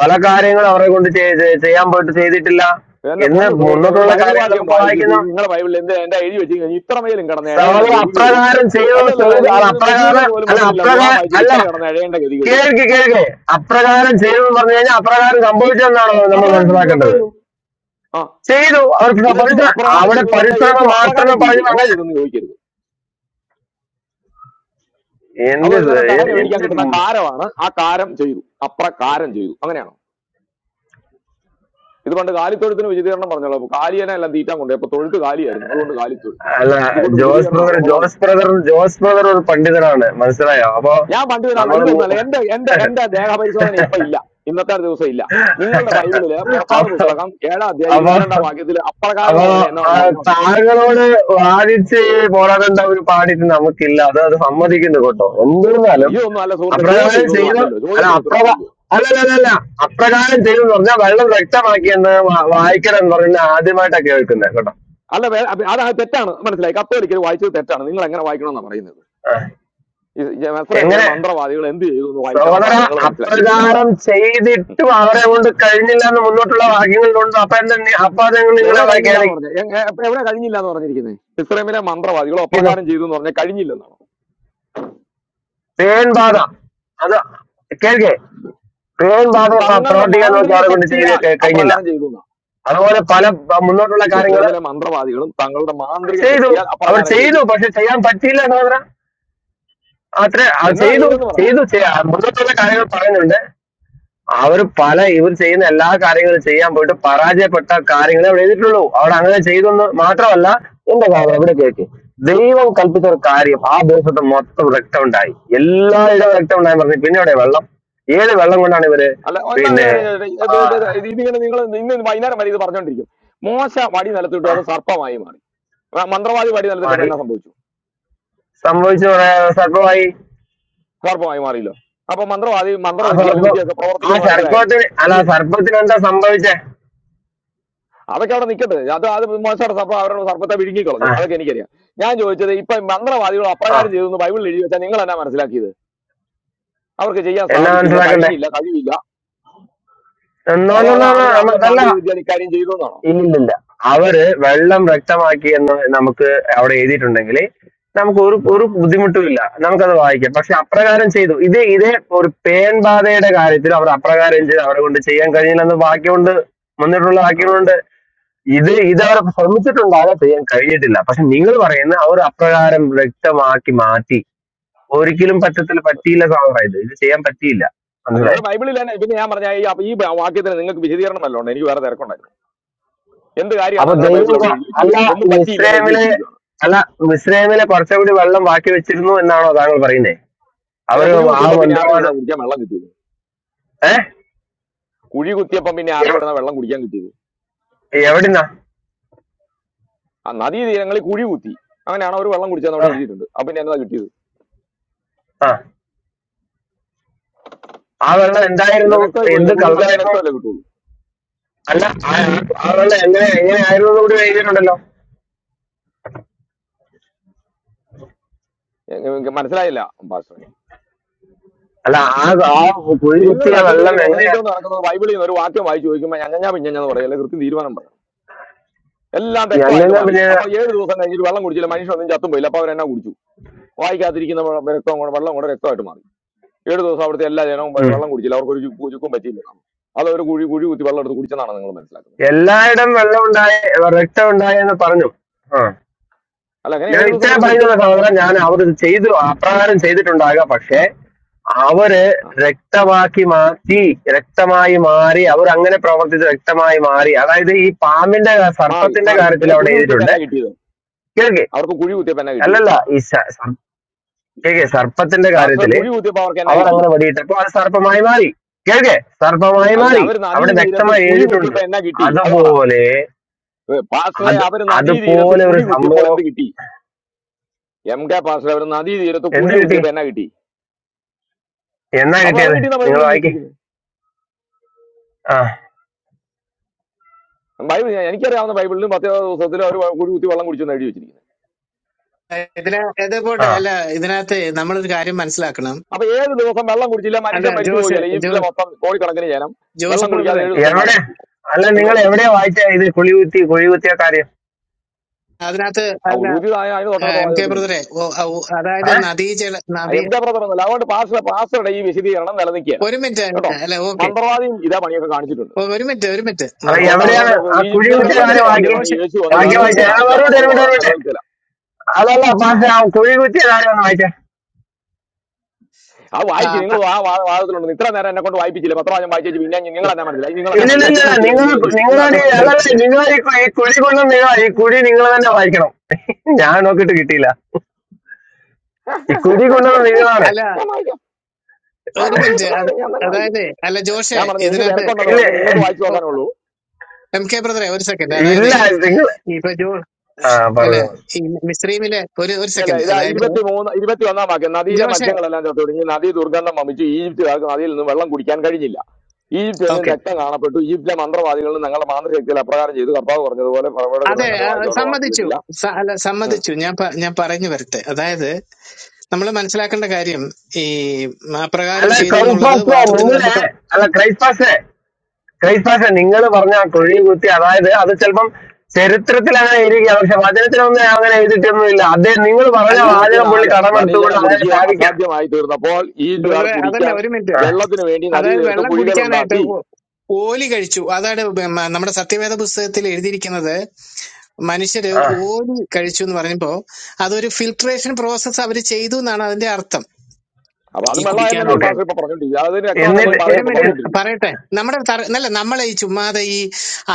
Speaker 8: പല കാര്യങ്ങളും അവരെ കൊണ്ട് ചെയ്ത് ചെയ്യാൻ പോയിട്ട് ചെയ്തിട്ടില്ല
Speaker 4: എന്റെ
Speaker 8: എന്ന്
Speaker 4: പൊന്ന് സുഹൃത്തെ ഒരു
Speaker 8: മുന്നോട്ടുള്ള
Speaker 4: ബൈബിൾ
Speaker 8: കാര്യങ്ങൾ
Speaker 4: വാക്യം
Speaker 8: നമുക്ക്
Speaker 4: വായിച്ചിട്ട്
Speaker 8: വായിക്കുന്നു
Speaker 4: ഇത് നിങ്ങളുടെ ബൈബിളിൽ എന്ത് എന്റെ എഴുതി വെച്ച് കഴിഞ്ഞാൽ ഇത്രമേലും കിടന്ന് എഴയേണ്ട
Speaker 8: സഹോദരൻ
Speaker 4: ഗതികേട്
Speaker 8: അപ്രകാരം ചെയ്തു
Speaker 4: അല്ലല്ല അല്ല,
Speaker 8: ചെയ്തു
Speaker 4: ഇത്
Speaker 8: അത്
Speaker 4: ഇത്
Speaker 8: അപ്രകാരം
Speaker 4: മുസ്ലിങ്ങൾക്ക് പോലും
Speaker 8: അല്ല
Speaker 4: വന്നിട്ടില്ല ഖുറാൻ
Speaker 8: അപ്രകാരം
Speaker 4: വായിച്ചിട്ട്
Speaker 8: അല്ല
Speaker 4: ഇത്ര കിടന്ന് എഴയേണ്ട ഗതികേട്
Speaker 8: കേൾക്ക് കേൾക്ക് അപ്രകാരം ചെയ്തു എന്ന് പറഞ്ഞു കഴിഞ്ഞാൽ അപ്രകാരം സംഭവിച്ചെന്നാണ് നമ്മൾ
Speaker 4: അപ്രകാരം ചെയ്തു
Speaker 8: മനസ്സിലാക്കേണ്ടത്
Speaker 4: അത്രയല്ലോ ആ
Speaker 8: ചെയ്തു അവർ
Speaker 4: യേശു
Speaker 8: പരിശ്രമം
Speaker 4: അപ്രകാരം
Speaker 8: അവിടെ
Speaker 4: ചെയ്തു എന്ന് പറഞ്ഞാൽ യേശു
Speaker 8: പരിശ്രമം മാത്രമേ
Speaker 4: അപ്രകാരം ചെയ്തു
Speaker 8: പറഞ്ഞു
Speaker 4: എന്നാ
Speaker 8: അങ്ങനെ
Speaker 4: ചെയ്തെന്ന് ചോദിക്കരുത് അത്
Speaker 8: എന്ത്
Speaker 4: ഒരു തരം കടക
Speaker 8: ഇത്?
Speaker 4: മേടിക്കാൻ കിട്ടുന്ന
Speaker 8: എന്ത്
Speaker 4: കാരമാണ് ആ കാരം ചെയ്തു അപ്രകാരം ചെയ്തു അങ്ങനെയാണോ ഇത് പണ്ട് കാലിത്തൊഴുത്തിന് വിശദീകരണം പറഞ്ഞല്ലോ കാലിയനെ എല്ലാം തീറ്റാൻ കൊണ്ടുപോയി അപ്പൊ തൊഴുത്ത് കാലിയായിരുന്നു അതുകൊണ്ട് കാലിത്തൊഴുത്ത്
Speaker 8: അല്ല
Speaker 4: ഇതുകൊണ്ട്
Speaker 8: ജോസ് ബ്രദർ
Speaker 4: വിശദീകരണമാണല്ലോ കൊള്ളാം
Speaker 8: ജോസ് ബ്രദർ ജോസ് ബ്രദർ ഒരു പണ്ഡിതനാണ് മനസ്സിലായോ അപ്പൊ
Speaker 4: ഞാൻ പണ്ട് ഇടാ
Speaker 8: നമ്മൾ
Speaker 4: ഇതൊന്നല്ല എന്റെ എന്റെ എന്റെ ദേഹപരിശോധന ഇപ്പൊ ഇല്ല ഇന്നത്തെ ദിവസം ഇല്ല നിങ്ങളുടെ ബൈബിളില് പുറപ്പാട്
Speaker 8: അപ്പൊ
Speaker 4: പുസ്തകം ഏഴാം അധ്യായം
Speaker 8: അപ്പൊ
Speaker 4: ഇരുപത്തിരണ്ടാം വാക്യത്തിൽ അപ്രകാരം
Speaker 8: അപ്പൊ
Speaker 4: എന്ന് പറഞ്ഞാൽ
Speaker 8: ആ
Speaker 4: എന്നാന്ന് പറഞ്ഞാൽ
Speaker 8: താരങ്ങളോട് വാദിച്ച് പോരാടേണ്ട ഒരു പാടിയിട്ട് നമുക്കില്ല അത് അത് സമ്മതിക്കുന്നു കേട്ടോ എന്നിരുന്നാലും
Speaker 4: ഇതൊന്നും അല്ല സുഹൃത്തെ ചോദ്യം
Speaker 8: അപ്രകാരം
Speaker 4: ഇതൊന്നും
Speaker 8: ചെയ്ത്
Speaker 4: അല്ലല്ലോ
Speaker 8: അല്ല
Speaker 4: ചോദ്യത്തിന്
Speaker 8: അപ്രക
Speaker 4: ഉത്തരവൊന്നും ഇല്ലയോ
Speaker 8: അല്ലല്ല അല്ല അപ്രകാരം ചെയ്തെന്ന് പറഞ്ഞാൽ വെള്ളം വ്യക്തമാക്കിയെന്ന് വാ- വായിക്കണം എന്ന് പറയുന്നത് ആദ്യമായിട്ടാണ് കേൾക്കുന്നത് കേട്ടോ
Speaker 4: അല്ല വേ- അപ്പൊ അത് തെറ്റാണ് മനസ്സിലായി കത്തോലിക്കൽ വായിച്ചത് തെറ്റാണ് നിങ്ങൾ എങ്ങനെ വായിക്കണമെന്നാണ് പറയുന്നത്
Speaker 8: ആ.
Speaker 4: മെസ്രൈമിലെ
Speaker 8: എങ്ങനെ
Speaker 4: മന്ത്രവാദികൾ എന്ത് ചെയ്തു എന്ന്
Speaker 8: സഹോദര
Speaker 4: വായിക്കണമെന്നാണ് നിങ്ങൾ മനസ്സിലാക്കിയത് പറ
Speaker 8: അപ്രകാരം ചെയ്തിട്ടും അവരെ കൊണ്ട് കഴിഞ്ഞില്ല എന്ന് മുന്നോട്ടുള്ള വാക്യങ്ങളിലുണ്ട് അപ്പൊ എന്താ നി- അപ്പൊ അത് ഞങ്ങൾ നിങ്ങളെ
Speaker 4: എവിടെ കഴിഞ്ഞില്ല എന്ന്
Speaker 8: വ്യാഖ്യാനിക്കുന്നു
Speaker 4: പറഞ്ഞു എവിടെ കഴിഞ്ഞില്ല എന്ന് പറഞ്ഞിരിക്കുന്നത് ഇസ്രൈമിലെ മന്ത്രവാദികൾ അപ്രകാരം ചെയ്തു എന്ന് പറഞ്ഞാൽ കഴിഞ്ഞില്ലെന്നാണ്
Speaker 8: പേൻ ബാധ
Speaker 4: ഉം.
Speaker 8: അത് കേൾക്കേ പേൻ ബാധ
Speaker 4: താ-
Speaker 8: പ-
Speaker 4: നിങ്ങളുടെ
Speaker 8: പ്രവർത്തിക്കാൻ നോക്കി
Speaker 4: മാന്ത്രിക
Speaker 8: അവരെ കൊണ്ട് ചെയ്ത്
Speaker 4: ശക്തിയാൽ
Speaker 8: ക- കഴിഞ്ഞില്ല
Speaker 4: അപ്രകാരം ചെയ്തു
Speaker 8: അതുപോലെ പല ബ- മുന്നോട്ടുള്ള കാര്യങ്ങൾ
Speaker 4: മിസ്രൈമിലെ മന്ത്രവാദികളും തങ്ങളുടെ മാന്ത്രിക
Speaker 8: ചെയ്തു
Speaker 4: ശക്തിയാൽ
Speaker 8: അവർ
Speaker 4: അപ്രകാരം
Speaker 8: ചെയ്തു
Speaker 4: ചെയ്തു
Speaker 8: പക്ഷെ ചെയ്യാൻ പറ്റിയില്ല സഹോദര അത്ര അത്
Speaker 4: എന്നതാ
Speaker 8: ചെയ്തു
Speaker 4: ചെയ്തെന്ന് പറ
Speaker 8: ചെയ്തു ചെയ്യാ- മുന്നോട്ടുള്ള കാര്യങ്ങൾ പറയുന്നുണ്ട് അവർ പല ഇവർ ചെയ്യുന്ന എല്ലാ കാര്യങ്ങളും ചെയ്യാൻ പോയിട്ട് പരാജയപ്പെട്ട കാര്യങ്ങളെ അവിടെ എഴുതിയിട്ടുള്ളൂ അവിടെ അങ്ങനെ ചെയ്തെന്ന് മാത്രമല്ല എന്റെ കാര്യം അവിടെ കേക്ക് ദൈവം കൽപ്പിച്ച ഒരു കാര്യം ആ ദിവസത്തെ മൊത്തം രക്തം ഉണ്ടായി എല്ലാവരുടെ രക്തം ഉണ്ടായി പറഞ്ഞു പിന്നെ അവിടെ വെള്ളം ഏത് വെള്ളം കൊണ്ടാണ് ഇവര്
Speaker 4: അല്ല എന്നാ ഇത്
Speaker 8: പിന്നെ
Speaker 4: കാര്യം ചെയ്തത്?
Speaker 8: ആ,
Speaker 4: ഇത് ഇത് ഇത് ഇത് ഇതിങ്ങനെ നിങ്ങൾ ഇന്ന് വൈകുന്നേരം വരെ ഇത് പറഞ്ഞുകൊണ്ടിരിക്കും മോശ വടി നിലത്തിട്ടു
Speaker 8: ആ,
Speaker 4: അത് സർപ്പമായി മാറി ആ മന്ത്രവാദി വടി നിലത്തിട്ടപ്പോ
Speaker 8: മാറി
Speaker 4: എന്നാ സംഭവിച്ചു
Speaker 8: സംഭവിച്ചു പറയാ സർപ്പമായി
Speaker 4: സർപ്പമായി മാറിയല്ലോ അപ്പൊ മന്ത്രവാദി
Speaker 8: ആ
Speaker 4: മന്ത്രവിദ്യ അല്ലെ
Speaker 8: സർപ്പം
Speaker 4: വിദ്യ ഒക്കെ
Speaker 8: ആ
Speaker 4: പ്രവർത്തിക്കുന്നു മനസ്സിലായല്ലോ
Speaker 8: സർപ്പത്തിന് അല്ല ആ
Speaker 4: ഇനി
Speaker 8: സർപ്പത്തിന് എന്താ സംഭവിച്ചേ
Speaker 4: അതൊക്കെ അവിടെ നിൽക്കട്ടെ അത് അത് മോശയുടെ സർപ്പം അവരുടെ സർപ്പത്തെ വിഴുങ്ങി കളഞ്ഞു
Speaker 8: ആ
Speaker 4: അതൊക്കെ എനിക്കറിയാം ഞാൻ ചോദിച്ചത് ഇപ്പൊ ഈ മന്ത്രവാദികൾ
Speaker 8: ആ
Speaker 4: അപ്രകാരം ചെയ്തു എന്ന് ബൈബിളിൽ എഴുതി വെച്ചാൽ നിങ്ങൾ എന്നാ മനസ്സിലാക്കിയത് അവർക്ക് ചെയ്യാൻ
Speaker 8: എന്നാ
Speaker 4: സാധിച്ചില്ല
Speaker 8: മനസ്സിലാക്കണ്ടേ
Speaker 4: കഴിഞ്ഞില്ല കഴിവില്ല
Speaker 8: എന്നോ
Speaker 4: അതോ അത്
Speaker 8: എന്നോ
Speaker 4: അവർ അവർ
Speaker 8: അതല്ല
Speaker 4: മാന്ത്രിക വിദ്യ ഇക്കാര്യം ചെയ്തു എന്നാണോ
Speaker 8: ഇല്ലില്ലില്ല. അവര് വെള്ളം വ്യക്തമാക്കി എന്ന് നമുക്ക് അവിടെ എഴുതിയിട്ടുണ്ടെങ്കിൽ നമുക്ക് ഒരു ഒരു ബുദ്ധിമുട്ടും ഇല്ല നമുക്കത് വായിക്കാം പക്ഷെ അപ്രകാരം ചെയ്തു ഇത് ഇതേ ഒരു പേൻ ബാധയുടെ കാര്യത്തിൽ അവർ അപ്രകാരം ചെയ്ത് അവരെ കൊണ്ട് ചെയ്യാൻ കഴിയില്ലെന്ന് വാക്യമുണ്ട് മുന്നിട്ടുള്ള
Speaker 4: ഓക്കെ
Speaker 8: വാക്യമുണ്ട് ഇത് ഇതവർ ശ്രമിച്ചിട്ടുണ്ടാകാൻ ചെയ്യാൻ കഴിഞ്ഞിട്ടില്ല പക്ഷെ നിങ്ങൾ പറയുന്ന അവർ അപ്രകാരം വ്യക്തമാക്കി മാറ്റി ഒരിക്കലും പറ്റത്തില്ല പറ്റിയില്ല സാധനം ഇത് ഇത് ചെയ്യാൻ പറ്റിയില്ല മനസ്സിലായോ
Speaker 4: നിങ്ങൾ ബൈബിളിൽ തന്നെ പിന്നെ ഞാൻ പറഞ്ഞ ഈ ഈ വാക്യത്തിന് നിങ്ങൾക്ക് വിശദീകരണം നല്ലോണം എനിക്ക് വേറെ തിരക്കുണ്ടായിരുന്നു എന്ത് കാര്യമാണ്
Speaker 8: അപ്പൊ
Speaker 4: നിങ്ങളുടെ
Speaker 8: ദൈവം
Speaker 4: ബൈബിൾ അവിടെ
Speaker 8: കൊ-
Speaker 4: എഴുതി
Speaker 8: അല്ല
Speaker 4: വെച്ചിരിക്കുന്നത് ഒന്നും
Speaker 8: ഈ
Speaker 4: പറ്റിയില്ലെന്ന് എഴുതി
Speaker 8: മിസ്രൈമിലെ
Speaker 4: വെച്ചിരിക്കുകയാണ്
Speaker 8: അല്ല മിസ്രൈമിലെ കുറച്ചുകൂടി വെള്ളം ബാക്കി വെച്ചിരുന്നു എന്നാണോ താങ്കൾ പറയുന്നേ
Speaker 4: പിന്നെ
Speaker 8: അവര്
Speaker 4: കുഴി
Speaker 8: ആ
Speaker 4: കുത്തിയപ്പോൾ പിന്നെ ആരുടെ ഇവിടുന്ന്
Speaker 8: മന്ത്രവാദം
Speaker 4: കുടിക്കാൻ വെള്ളം കിട്ടിയത്
Speaker 8: ഏ
Speaker 4: കുഴി കുത്തിയപ്പോൾ പിന്നെ ആരുടെ
Speaker 8: എവ-
Speaker 4: ഇവിടുന്ന് വെള്ളം കുടിക്കാൻ കിട്ടിയത്
Speaker 8: എവിടുന്നാ
Speaker 4: ആ നദീ തീരങ്ങളിൽ കുഴി കുത്തി അങ്ങനെയാണ് അവർ വെള്ളം കുടിച്ചതെന്ന്
Speaker 8: ആ
Speaker 4: അവിടെ എഴുതിയിട്ടുണ്ട് അപ്പൊ പിന്നെ എന്താ കിട്ടിയത്
Speaker 8: ആ ആ വെള്ളം
Speaker 4: എല്ലാം
Speaker 8: എന്തായിരുന്നു
Speaker 4: നെക്കമായി പോയില്ല
Speaker 8: എന്ത്
Speaker 4: കുഴി കുത്തിയാലും
Speaker 8: കളറായിരുന്നു
Speaker 4: നെക്കമല്ലേ കിട്ടുള്ളൂ
Speaker 8: അല്ല ആ ആ വെള്ളം എങ്ങനെ എങ്ങനെയായിരുന്നു എന്ന് കൂടി എഴുതിയിട്ടുണ്ടല്ലോ
Speaker 4: എ- എനിക്ക് മനസ്സിലായില്ല പാസ്റ്ററെ
Speaker 8: അല്ല ആ ആ കുഴി
Speaker 4: നിങ്ങൾ
Speaker 8: കുത്തിയ
Speaker 4: കട്ടത്തിൽ
Speaker 8: വെള്ളം
Speaker 4: വെച്ച്
Speaker 8: എങ്ങനെയാ
Speaker 4: പ്രസംഗിച്ചുകൊണ്ട് നടക്കുന്നത് ബൈബിളിൽ നിന്ന് ഒരു വാക്യം വായിച്ചു ചോദിക്കുമ്പോൾ ഞഞ്ഞാ പിഞ്ഞെന്ന് പറയും അല്ലെങ്കിൽ കൃത്യം തീരുമാനം പറയും എല്ലാം വ്യക്തമായിട്ട്
Speaker 8: എങ്ങനെ
Speaker 4: മാറി
Speaker 8: പിന്നെ
Speaker 4: അപ്പൊ ഏഴ് ദിവസം കഴിഞ്ഞിട്ട് വെള്ളം കുടിച്ചില്ല മനുഷ്യൻ ഒന്നും ചത്തും പോയില്ല അപ്പൊ അവരെന്നാ കുടിച്ചു വായിക്കാതിരിക്കുന്ന വെള്ളം- രക്തം കൂടെ വെള്ളം കൂടെ രക്തമായിട്ട് മാറി ഏഴ് ദിവസം അവിടുത്തെ എല്ലാ ജനവും വെ-
Speaker 8: ഉം.
Speaker 4: വെള്ളം കുടിച്ചില്ല അവർക്ക് ഒരു ചു- ചുക്കും പറ്റിയില്ല അത് ഒരു കുഴി കുഴി കുത്തി വെള്ളം എടുത്ത് കുടിച്ചെന്നാണ് നിങ്ങൾ മനസ്സിലാക്കുന്നത്
Speaker 8: എല്ലായിടം വെള്ളം ഉണ്ടായ രക്തം ഉണ്ടായെന്ന് പറഞ്ഞു ആ
Speaker 4: അല്ല അങ്ങനെ
Speaker 8: ഞാൻ
Speaker 4: ഏഴ് ദിവസം
Speaker 8: ഇത്രേ
Speaker 4: പിന്നെ
Speaker 8: പറയുന്നത്
Speaker 4: കുടിച്ചെന്ന് പറ
Speaker 8: സഹോദരൻ ഞാൻ അവർ ചെയ്തു അപ്രകാരം ചെയ്തിട്ടുണ്ടാകാം പക്ഷേ അവര്
Speaker 4: ആ,
Speaker 8: രക്തമാക്കി മാറ്റി രക്തമായി മാറി അവർ അങ്ങനെ പ്രവർത്തിച്ച് രക്തമായി മാറി അതായത് ഈ പാമ്പിന്റെ
Speaker 4: മാറി
Speaker 8: സർപ്പത്തിന്റെ
Speaker 4: മാറി
Speaker 8: കാര്യത്തിൽ
Speaker 4: പിന്നെ
Speaker 8: അവിടെ
Speaker 4: കുഴി കുത്തിയപ്പോ
Speaker 8: എഴുതിയിട്ടുണ്ട്
Speaker 4: എന്നാ കിട്ടിയത്
Speaker 8: കേൾക്കെ
Speaker 4: അവർക്ക് കുഴി കുത്തിയപ്പോ എന്നാ കിട്ടിയത്
Speaker 8: അല്ലല്ല ഈ സ- സർ- കേൾക്കെ സർപ്പത്തിന്റെ
Speaker 4: പാസ്റ്റർ
Speaker 8: കാര്യത്തില്
Speaker 4: കുഴി കുത്തിയപ്പോ അവർക്ക് എന്നാ
Speaker 8: അവർ
Speaker 4: കിട്ടി
Speaker 8: അങ്ങനെ വെടിയിട്ടപ്പോ അത് സർപ്പമായി മാറി കേൾക്കെ സർപ്പമായി
Speaker 4: അല്ലെങ്കിൽ
Speaker 8: മാറി
Speaker 4: അവർ നദീ
Speaker 8: അവിടെ
Speaker 4: തീരത്ത്
Speaker 8: വ്യക്തമായി
Speaker 4: കുഴി
Speaker 8: എഴുതിയിട്ടുണ്ട്
Speaker 4: കുത്തിയപ്പോ എന്നാ കിട്ടി അത് പറ
Speaker 8: അതുപോലെ
Speaker 4: ഏ, പാസ്റ്ററെ
Speaker 8: അത്
Speaker 4: അവർ നദീ തീരത്ത്
Speaker 8: അതുപോലെ ഒരു
Speaker 4: കുഴി കുത്തിയപ്പോൾ
Speaker 8: സംഭവം
Speaker 4: എന്ത് കിട്ടി എം കെ പാസ്റ്റർ അവർ നദീ തീരത്ത്
Speaker 8: എന്ത്
Speaker 4: കുഴി
Speaker 8: കിട്ടി
Speaker 4: കുത്തിയപ്പോ എന്നാ കിട്ടി
Speaker 8: എന്നാ
Speaker 4: അപ്പൊ വെള്ളം
Speaker 8: കിട്ടിയത്
Speaker 4: കിട്ടിയെന്നാ
Speaker 8: നിങ്ങൾ
Speaker 4: ബൈബിളിൽ എഴുതി
Speaker 8: വായിക്കേ
Speaker 4: വെച്ചിരിക്കുന്നത്
Speaker 8: ആ
Speaker 4: ബൈബിൾ ഞാൻ- എനിക്കറിയാവുന്ന ബൈബിളിലും പത്തേ ദിവസത്തിൽ അവർ കുഴി കുത്തി വെള്ളം കുടിച്ചെന്ന് എഴുതി വെച്ചിരിക്കുന്നു
Speaker 6: ഇതിന ഇത് പോട്ടെ
Speaker 8: ആ
Speaker 6: അല്ല ഇതിനകത്ത് നമ്മളൊരു കാര്യം മനസ്സിലാക്കണം
Speaker 4: അപ്പൊ ഏഴ് ദിവസം വെള്ളം കുടിച്ചില്ല
Speaker 6: അല്ല
Speaker 4: മനുഷ്യൻ മരിച്ചു
Speaker 6: ജോഷ്
Speaker 4: പോവുകയല്ല ഈജിപ്തിലെ
Speaker 6: ജോഷ്
Speaker 4: മൊത്തം കോടിക്കണക്കിന് ജനം
Speaker 6: ജോഷ്
Speaker 4: വെള്ളം കുടിക്കാതെ
Speaker 6: ബ്രദറെ
Speaker 4: ഏഴ് ദിവസം
Speaker 8: എവിടെ
Speaker 4: താമസം
Speaker 8: അല്ല
Speaker 4: എന്തോ
Speaker 8: നിങ്ങൾ എവിടെയാ വായിച്ച ഇത് കുഴി കുത്തി കുഴി കുത്തിയ കാര്യം
Speaker 6: അതിനകത്ത്
Speaker 4: ആ
Speaker 6: അല്ല
Speaker 4: ഉഴുതിതായ അതിന്
Speaker 6: ആ,
Speaker 4: തൊട്ടടുത്ത
Speaker 6: എം കെ
Speaker 4: വാചകത്തിലുണ്ട്
Speaker 6: ബ്രദറെ ഓ, ആ, ഓ, അതായത്
Speaker 8: ഏ
Speaker 6: നദീജല
Speaker 4: ആ
Speaker 6: നദീ
Speaker 4: എം കെ ബ്രദർ എന്നല്ല അതുകൊണ്ട് പാസ്റ്റർ പാസ്റ്ററുടെ ഈ വിശദീകരണം നിലനിൽക്കുകയില്ല
Speaker 6: ഒരു
Speaker 4: കേട്ടോ
Speaker 6: മിനിറ്റ് അല്ല ഓക്കെ
Speaker 4: മന്ത്രവാദിയും ഇതേ പണിയൊക്കെ കാണിച്ചിട്ടുണ്ട്
Speaker 6: ഒരു മിനിറ്റ് ഒരു മിനിറ്റ്
Speaker 8: അത്
Speaker 4: അതുകൊണ്ട്
Speaker 6: മന്ത്രവാദി
Speaker 8: എവിടെയാണ്
Speaker 4: അതുകൊണ്ട് ഇപ്പൊ
Speaker 8: ആ കുഴി
Speaker 4: ഈജിപ്തിലെ
Speaker 6: ഒരു
Speaker 8: കുത്തിയ
Speaker 4: വെള്ളം
Speaker 6: മിനിറ്റ്
Speaker 8: കാര്യം
Speaker 4: വ്യക്തമാക്കിയ
Speaker 8: വായിക്കേ
Speaker 4: പണി
Speaker 6: ജോഷ്
Speaker 4: യേശു വന്ന്
Speaker 6: അല്ല
Speaker 4: വേറെ
Speaker 8: വാക്യം വായിച്ച
Speaker 4: തരത്തിൽ
Speaker 6: ജോഷേ
Speaker 8: ഞാൻ വേറോട്ട്
Speaker 4: കാണിച്ചാന്നുള്ളത്
Speaker 8: ഒരുമിട്ട്
Speaker 4: വാദം
Speaker 8: ഒരുമിട്ട്
Speaker 4: നിലനിൽക്കില്ല
Speaker 8: അതല്ല
Speaker 4: ആ
Speaker 8: പാസ് ആ
Speaker 4: ഓക്കെ
Speaker 8: കുഴി കുത്തിയ കാര്യം ഒന്ന് വായിച്ചേ
Speaker 4: ആ
Speaker 6: ആ
Speaker 4: വായിക്കും നിങ്ങൾ
Speaker 6: ആ,
Speaker 4: ആ വാ- വാദത്തിലുണ്ട് ഇത്ര നേരം എന്നെ കൊണ്ട് വായിപ്പിച്ചില്ല പത്ര വാചകം വായിച്ചു പിന്നെ ഞാൻ- നിങ്ങൾ എന്നാ മനസ്സിലായി നിങ്ങൾ എന്നാ
Speaker 8: ഇല്ല ഇല്ല
Speaker 4: മനസ്സിലായി
Speaker 8: ഇല്ല
Speaker 4: കുട്ടി കുത്തി കഴിയും
Speaker 8: നിങ്ങൾ
Speaker 4: പിന്നെ ചോദിക്കും നിങ്ങൾ
Speaker 8: നിങ്ങളാണ്
Speaker 4: എന്നാ
Speaker 8: ഈ-
Speaker 4: മനസ്സിലായി
Speaker 8: അതല്ല
Speaker 6: ജോഷ്
Speaker 8: നിങ്ങൾ ഈ കു- ഈ കുഴി കൊണ്ടുവന്ന് നിങ്ങൾ ഈ കുഴി നിങ്ങൾ തന്നെ വായിക്കണം ഞാൻ നോക്കിട്ട് കിട്ടിയില്ല ഈ കുഴി കൊണ്ടുവന്ന് നിങ്ങളാണ്
Speaker 6: അല്ല
Speaker 4: ഞാൻ വായിക്കാം ആ,
Speaker 6: ഒരു
Speaker 4: ഒരു
Speaker 6: മിനിറ്റ്
Speaker 4: ദിവസം
Speaker 6: അത്
Speaker 4: നേരം ഞാൻ തന്നെ വായിക്കും
Speaker 6: അതായത് അല്ല ജോഷേ
Speaker 4: ഞാൻ പറഞ്ഞു എനിക്ക്
Speaker 6: ഇതിനകത്ത്
Speaker 4: തിരക്കുണ്ടെന്ന്
Speaker 6: എ-
Speaker 8: ഇല്ല
Speaker 4: പറഞ്ഞു
Speaker 6: ഓ-
Speaker 4: നിങ്ങൾക്ക് വായിച്ചു
Speaker 6: ഓ,
Speaker 4: നോക്കാനുള്ളൂ
Speaker 6: എം കെ ബ്രദറെ ഒരു സെക്കൻഡ് അതായത്
Speaker 8: ഇല്ല നിങ്ങൾ
Speaker 6: ഇപ്പൊ ജോ
Speaker 8: ആ
Speaker 6: അല്ല
Speaker 8: പറഞ്ഞു
Speaker 6: ഈ മിസ്ത്രീമിലെ ഒരു ഒരു
Speaker 4: അല്ല
Speaker 6: സെക്കൻഡ്
Speaker 4: ഇതാ
Speaker 6: അതായത്
Speaker 4: ഇരുപത്തി മൂന്ന് ഇരുപത്തി ഒന്നാം വാക്യം നദിയിലെ
Speaker 6: ജോഷേ
Speaker 4: മത്സ്യങ്ങളെല്ലാം ചത്തു തുടങ്ങി നദി ദുർഗന്ധം വമിച്ചു ഈജിപ്തുകാർക്ക് നദിയിൽ നിന്ന് വെള്ളം കുടിക്കാൻ കഴിഞ്ഞില്ല ഈജിപ്തിൽ നിന്ന്
Speaker 6: ഓക്കെ
Speaker 4: രക്തം കാണപ്പെട്ടു ഈജിപ്തിലെ മന്ത്രവാദികളും ഞങ്ങളുടെ മാന്ത്രശക്തിയിൽ അപ്രകാരം ചെയ്തു കർത്താവ് പറഞ്ഞതുപോലെ ഫറവയുടെ
Speaker 6: അതെ
Speaker 4: കൃതം
Speaker 6: ആ,
Speaker 4: കണ്ടുമായി അവരുടെ വാക്ക്
Speaker 6: സമ്മതിച്ചു
Speaker 4: കേട്ടില്ല
Speaker 6: സ- അല്ല
Speaker 4: ഉം.
Speaker 6: സമ്മതിച്ചു ഞാൻ പ- ഞാൻ പറഞ്ഞു വരട്ടെ അതായത് നമ്മൾ മനസ്സിലാക്കേണ്ട കാര്യം ഈ അപ്രകാരം
Speaker 8: അല്ല
Speaker 6: ചെയ്തു എന്നുള്ളത്
Speaker 8: ക്രൈസ്പാസ്
Speaker 6: വാദത്തിന് നമ്മൾ
Speaker 8: നിങ്ങളെ
Speaker 6: സം-
Speaker 8: അല്ല ക്രൈസ്പാസ് കൈത്താക്ക നിങ്ങൾ പറഞ്ഞ ആ കുഴി കുത്തി അതായത് അത് ചിലപ്പം ചരിത്രത്തിൽ അങ്ങനെ ഇരിക്കുക പക്ഷെ വചനത്തിലൊന്നും അങ്ങനെ എഴുതിയിട്ടൊന്നുമില്ല അദ്ദേഹം നിങ്ങൾ പറഞ്ഞ
Speaker 6: അല്ല
Speaker 8: വാചകം പുള്ളി
Speaker 4: ഇരുപത്തിനാല്
Speaker 8: കടമെടുത്തുകൊണ്ട്
Speaker 4: നദീജലം
Speaker 8: അങ്ങനെ
Speaker 4: കുടിക്കുക
Speaker 8: സ്ഥാപിക്കണം
Speaker 4: അസാധ്യമായി തീർന്നപ്പോൾ ഈജിപ്തുകാർ
Speaker 6: ബ്രദറെ അതല്ല
Speaker 4: കുടിക്കാൻ
Speaker 6: ഒരു മിനിറ്റ്
Speaker 8: ആ
Speaker 4: വെള്ളത്തിന് വേണ്ടി നദി
Speaker 6: അതായത്
Speaker 4: തീർത്ത്
Speaker 6: വെള്ളം
Speaker 4: കുഴികൾ
Speaker 6: കുടിക്കാനായിട്ട്
Speaker 4: ഉണ്ടാക്കി
Speaker 6: ഓ- ഓലി കഴിച്ചു അതാണ് ബ- മ- നമ്മുടെ സത്യവേദ പുസ്തകത്തിൽ എഴുതിയിരിക്കുന്നത് മനുഷ്യര്
Speaker 8: ആ
Speaker 6: ഓടി കഴിച്ചു എന്ന് പറയുമ്പോ അതൊരു ഫിൽട്രേഷൻ പ്രോസസ്സ് അവർ ചെയ്തു എന്നാണ് അതിന്റെ അർത്ഥം
Speaker 4: അപ്പൊ അത്
Speaker 6: ഈ
Speaker 4: വെള്ളമായെന്നല്ല
Speaker 6: കുടിക്കാനുള്ള
Speaker 4: ഈ
Speaker 8: ഓക്കെ
Speaker 6: വെള്ളം
Speaker 4: പാസ്റ്റർ ഇപ്പൊ പറഞ്ഞോണ്ടിരിക്കുന്നത് അതിന് രക്തമാണെന്നല്ല
Speaker 8: എന്നിട്ട്
Speaker 4: ഈ
Speaker 6: ഒരു
Speaker 4: പാസ്റ്റർ
Speaker 6: ഒരു
Speaker 8: എ-
Speaker 4: ഇപ്പൊ
Speaker 6: മിനിറ്റ്
Speaker 8: എൻ-
Speaker 4: പറഞ്ഞോണ്ടിരിക്കുന്നത്
Speaker 6: പറയട്ടെ നമ്മുടെ തർ- അല്ല നമ്മളെ ഈ ചുമ്മാതെ ഈ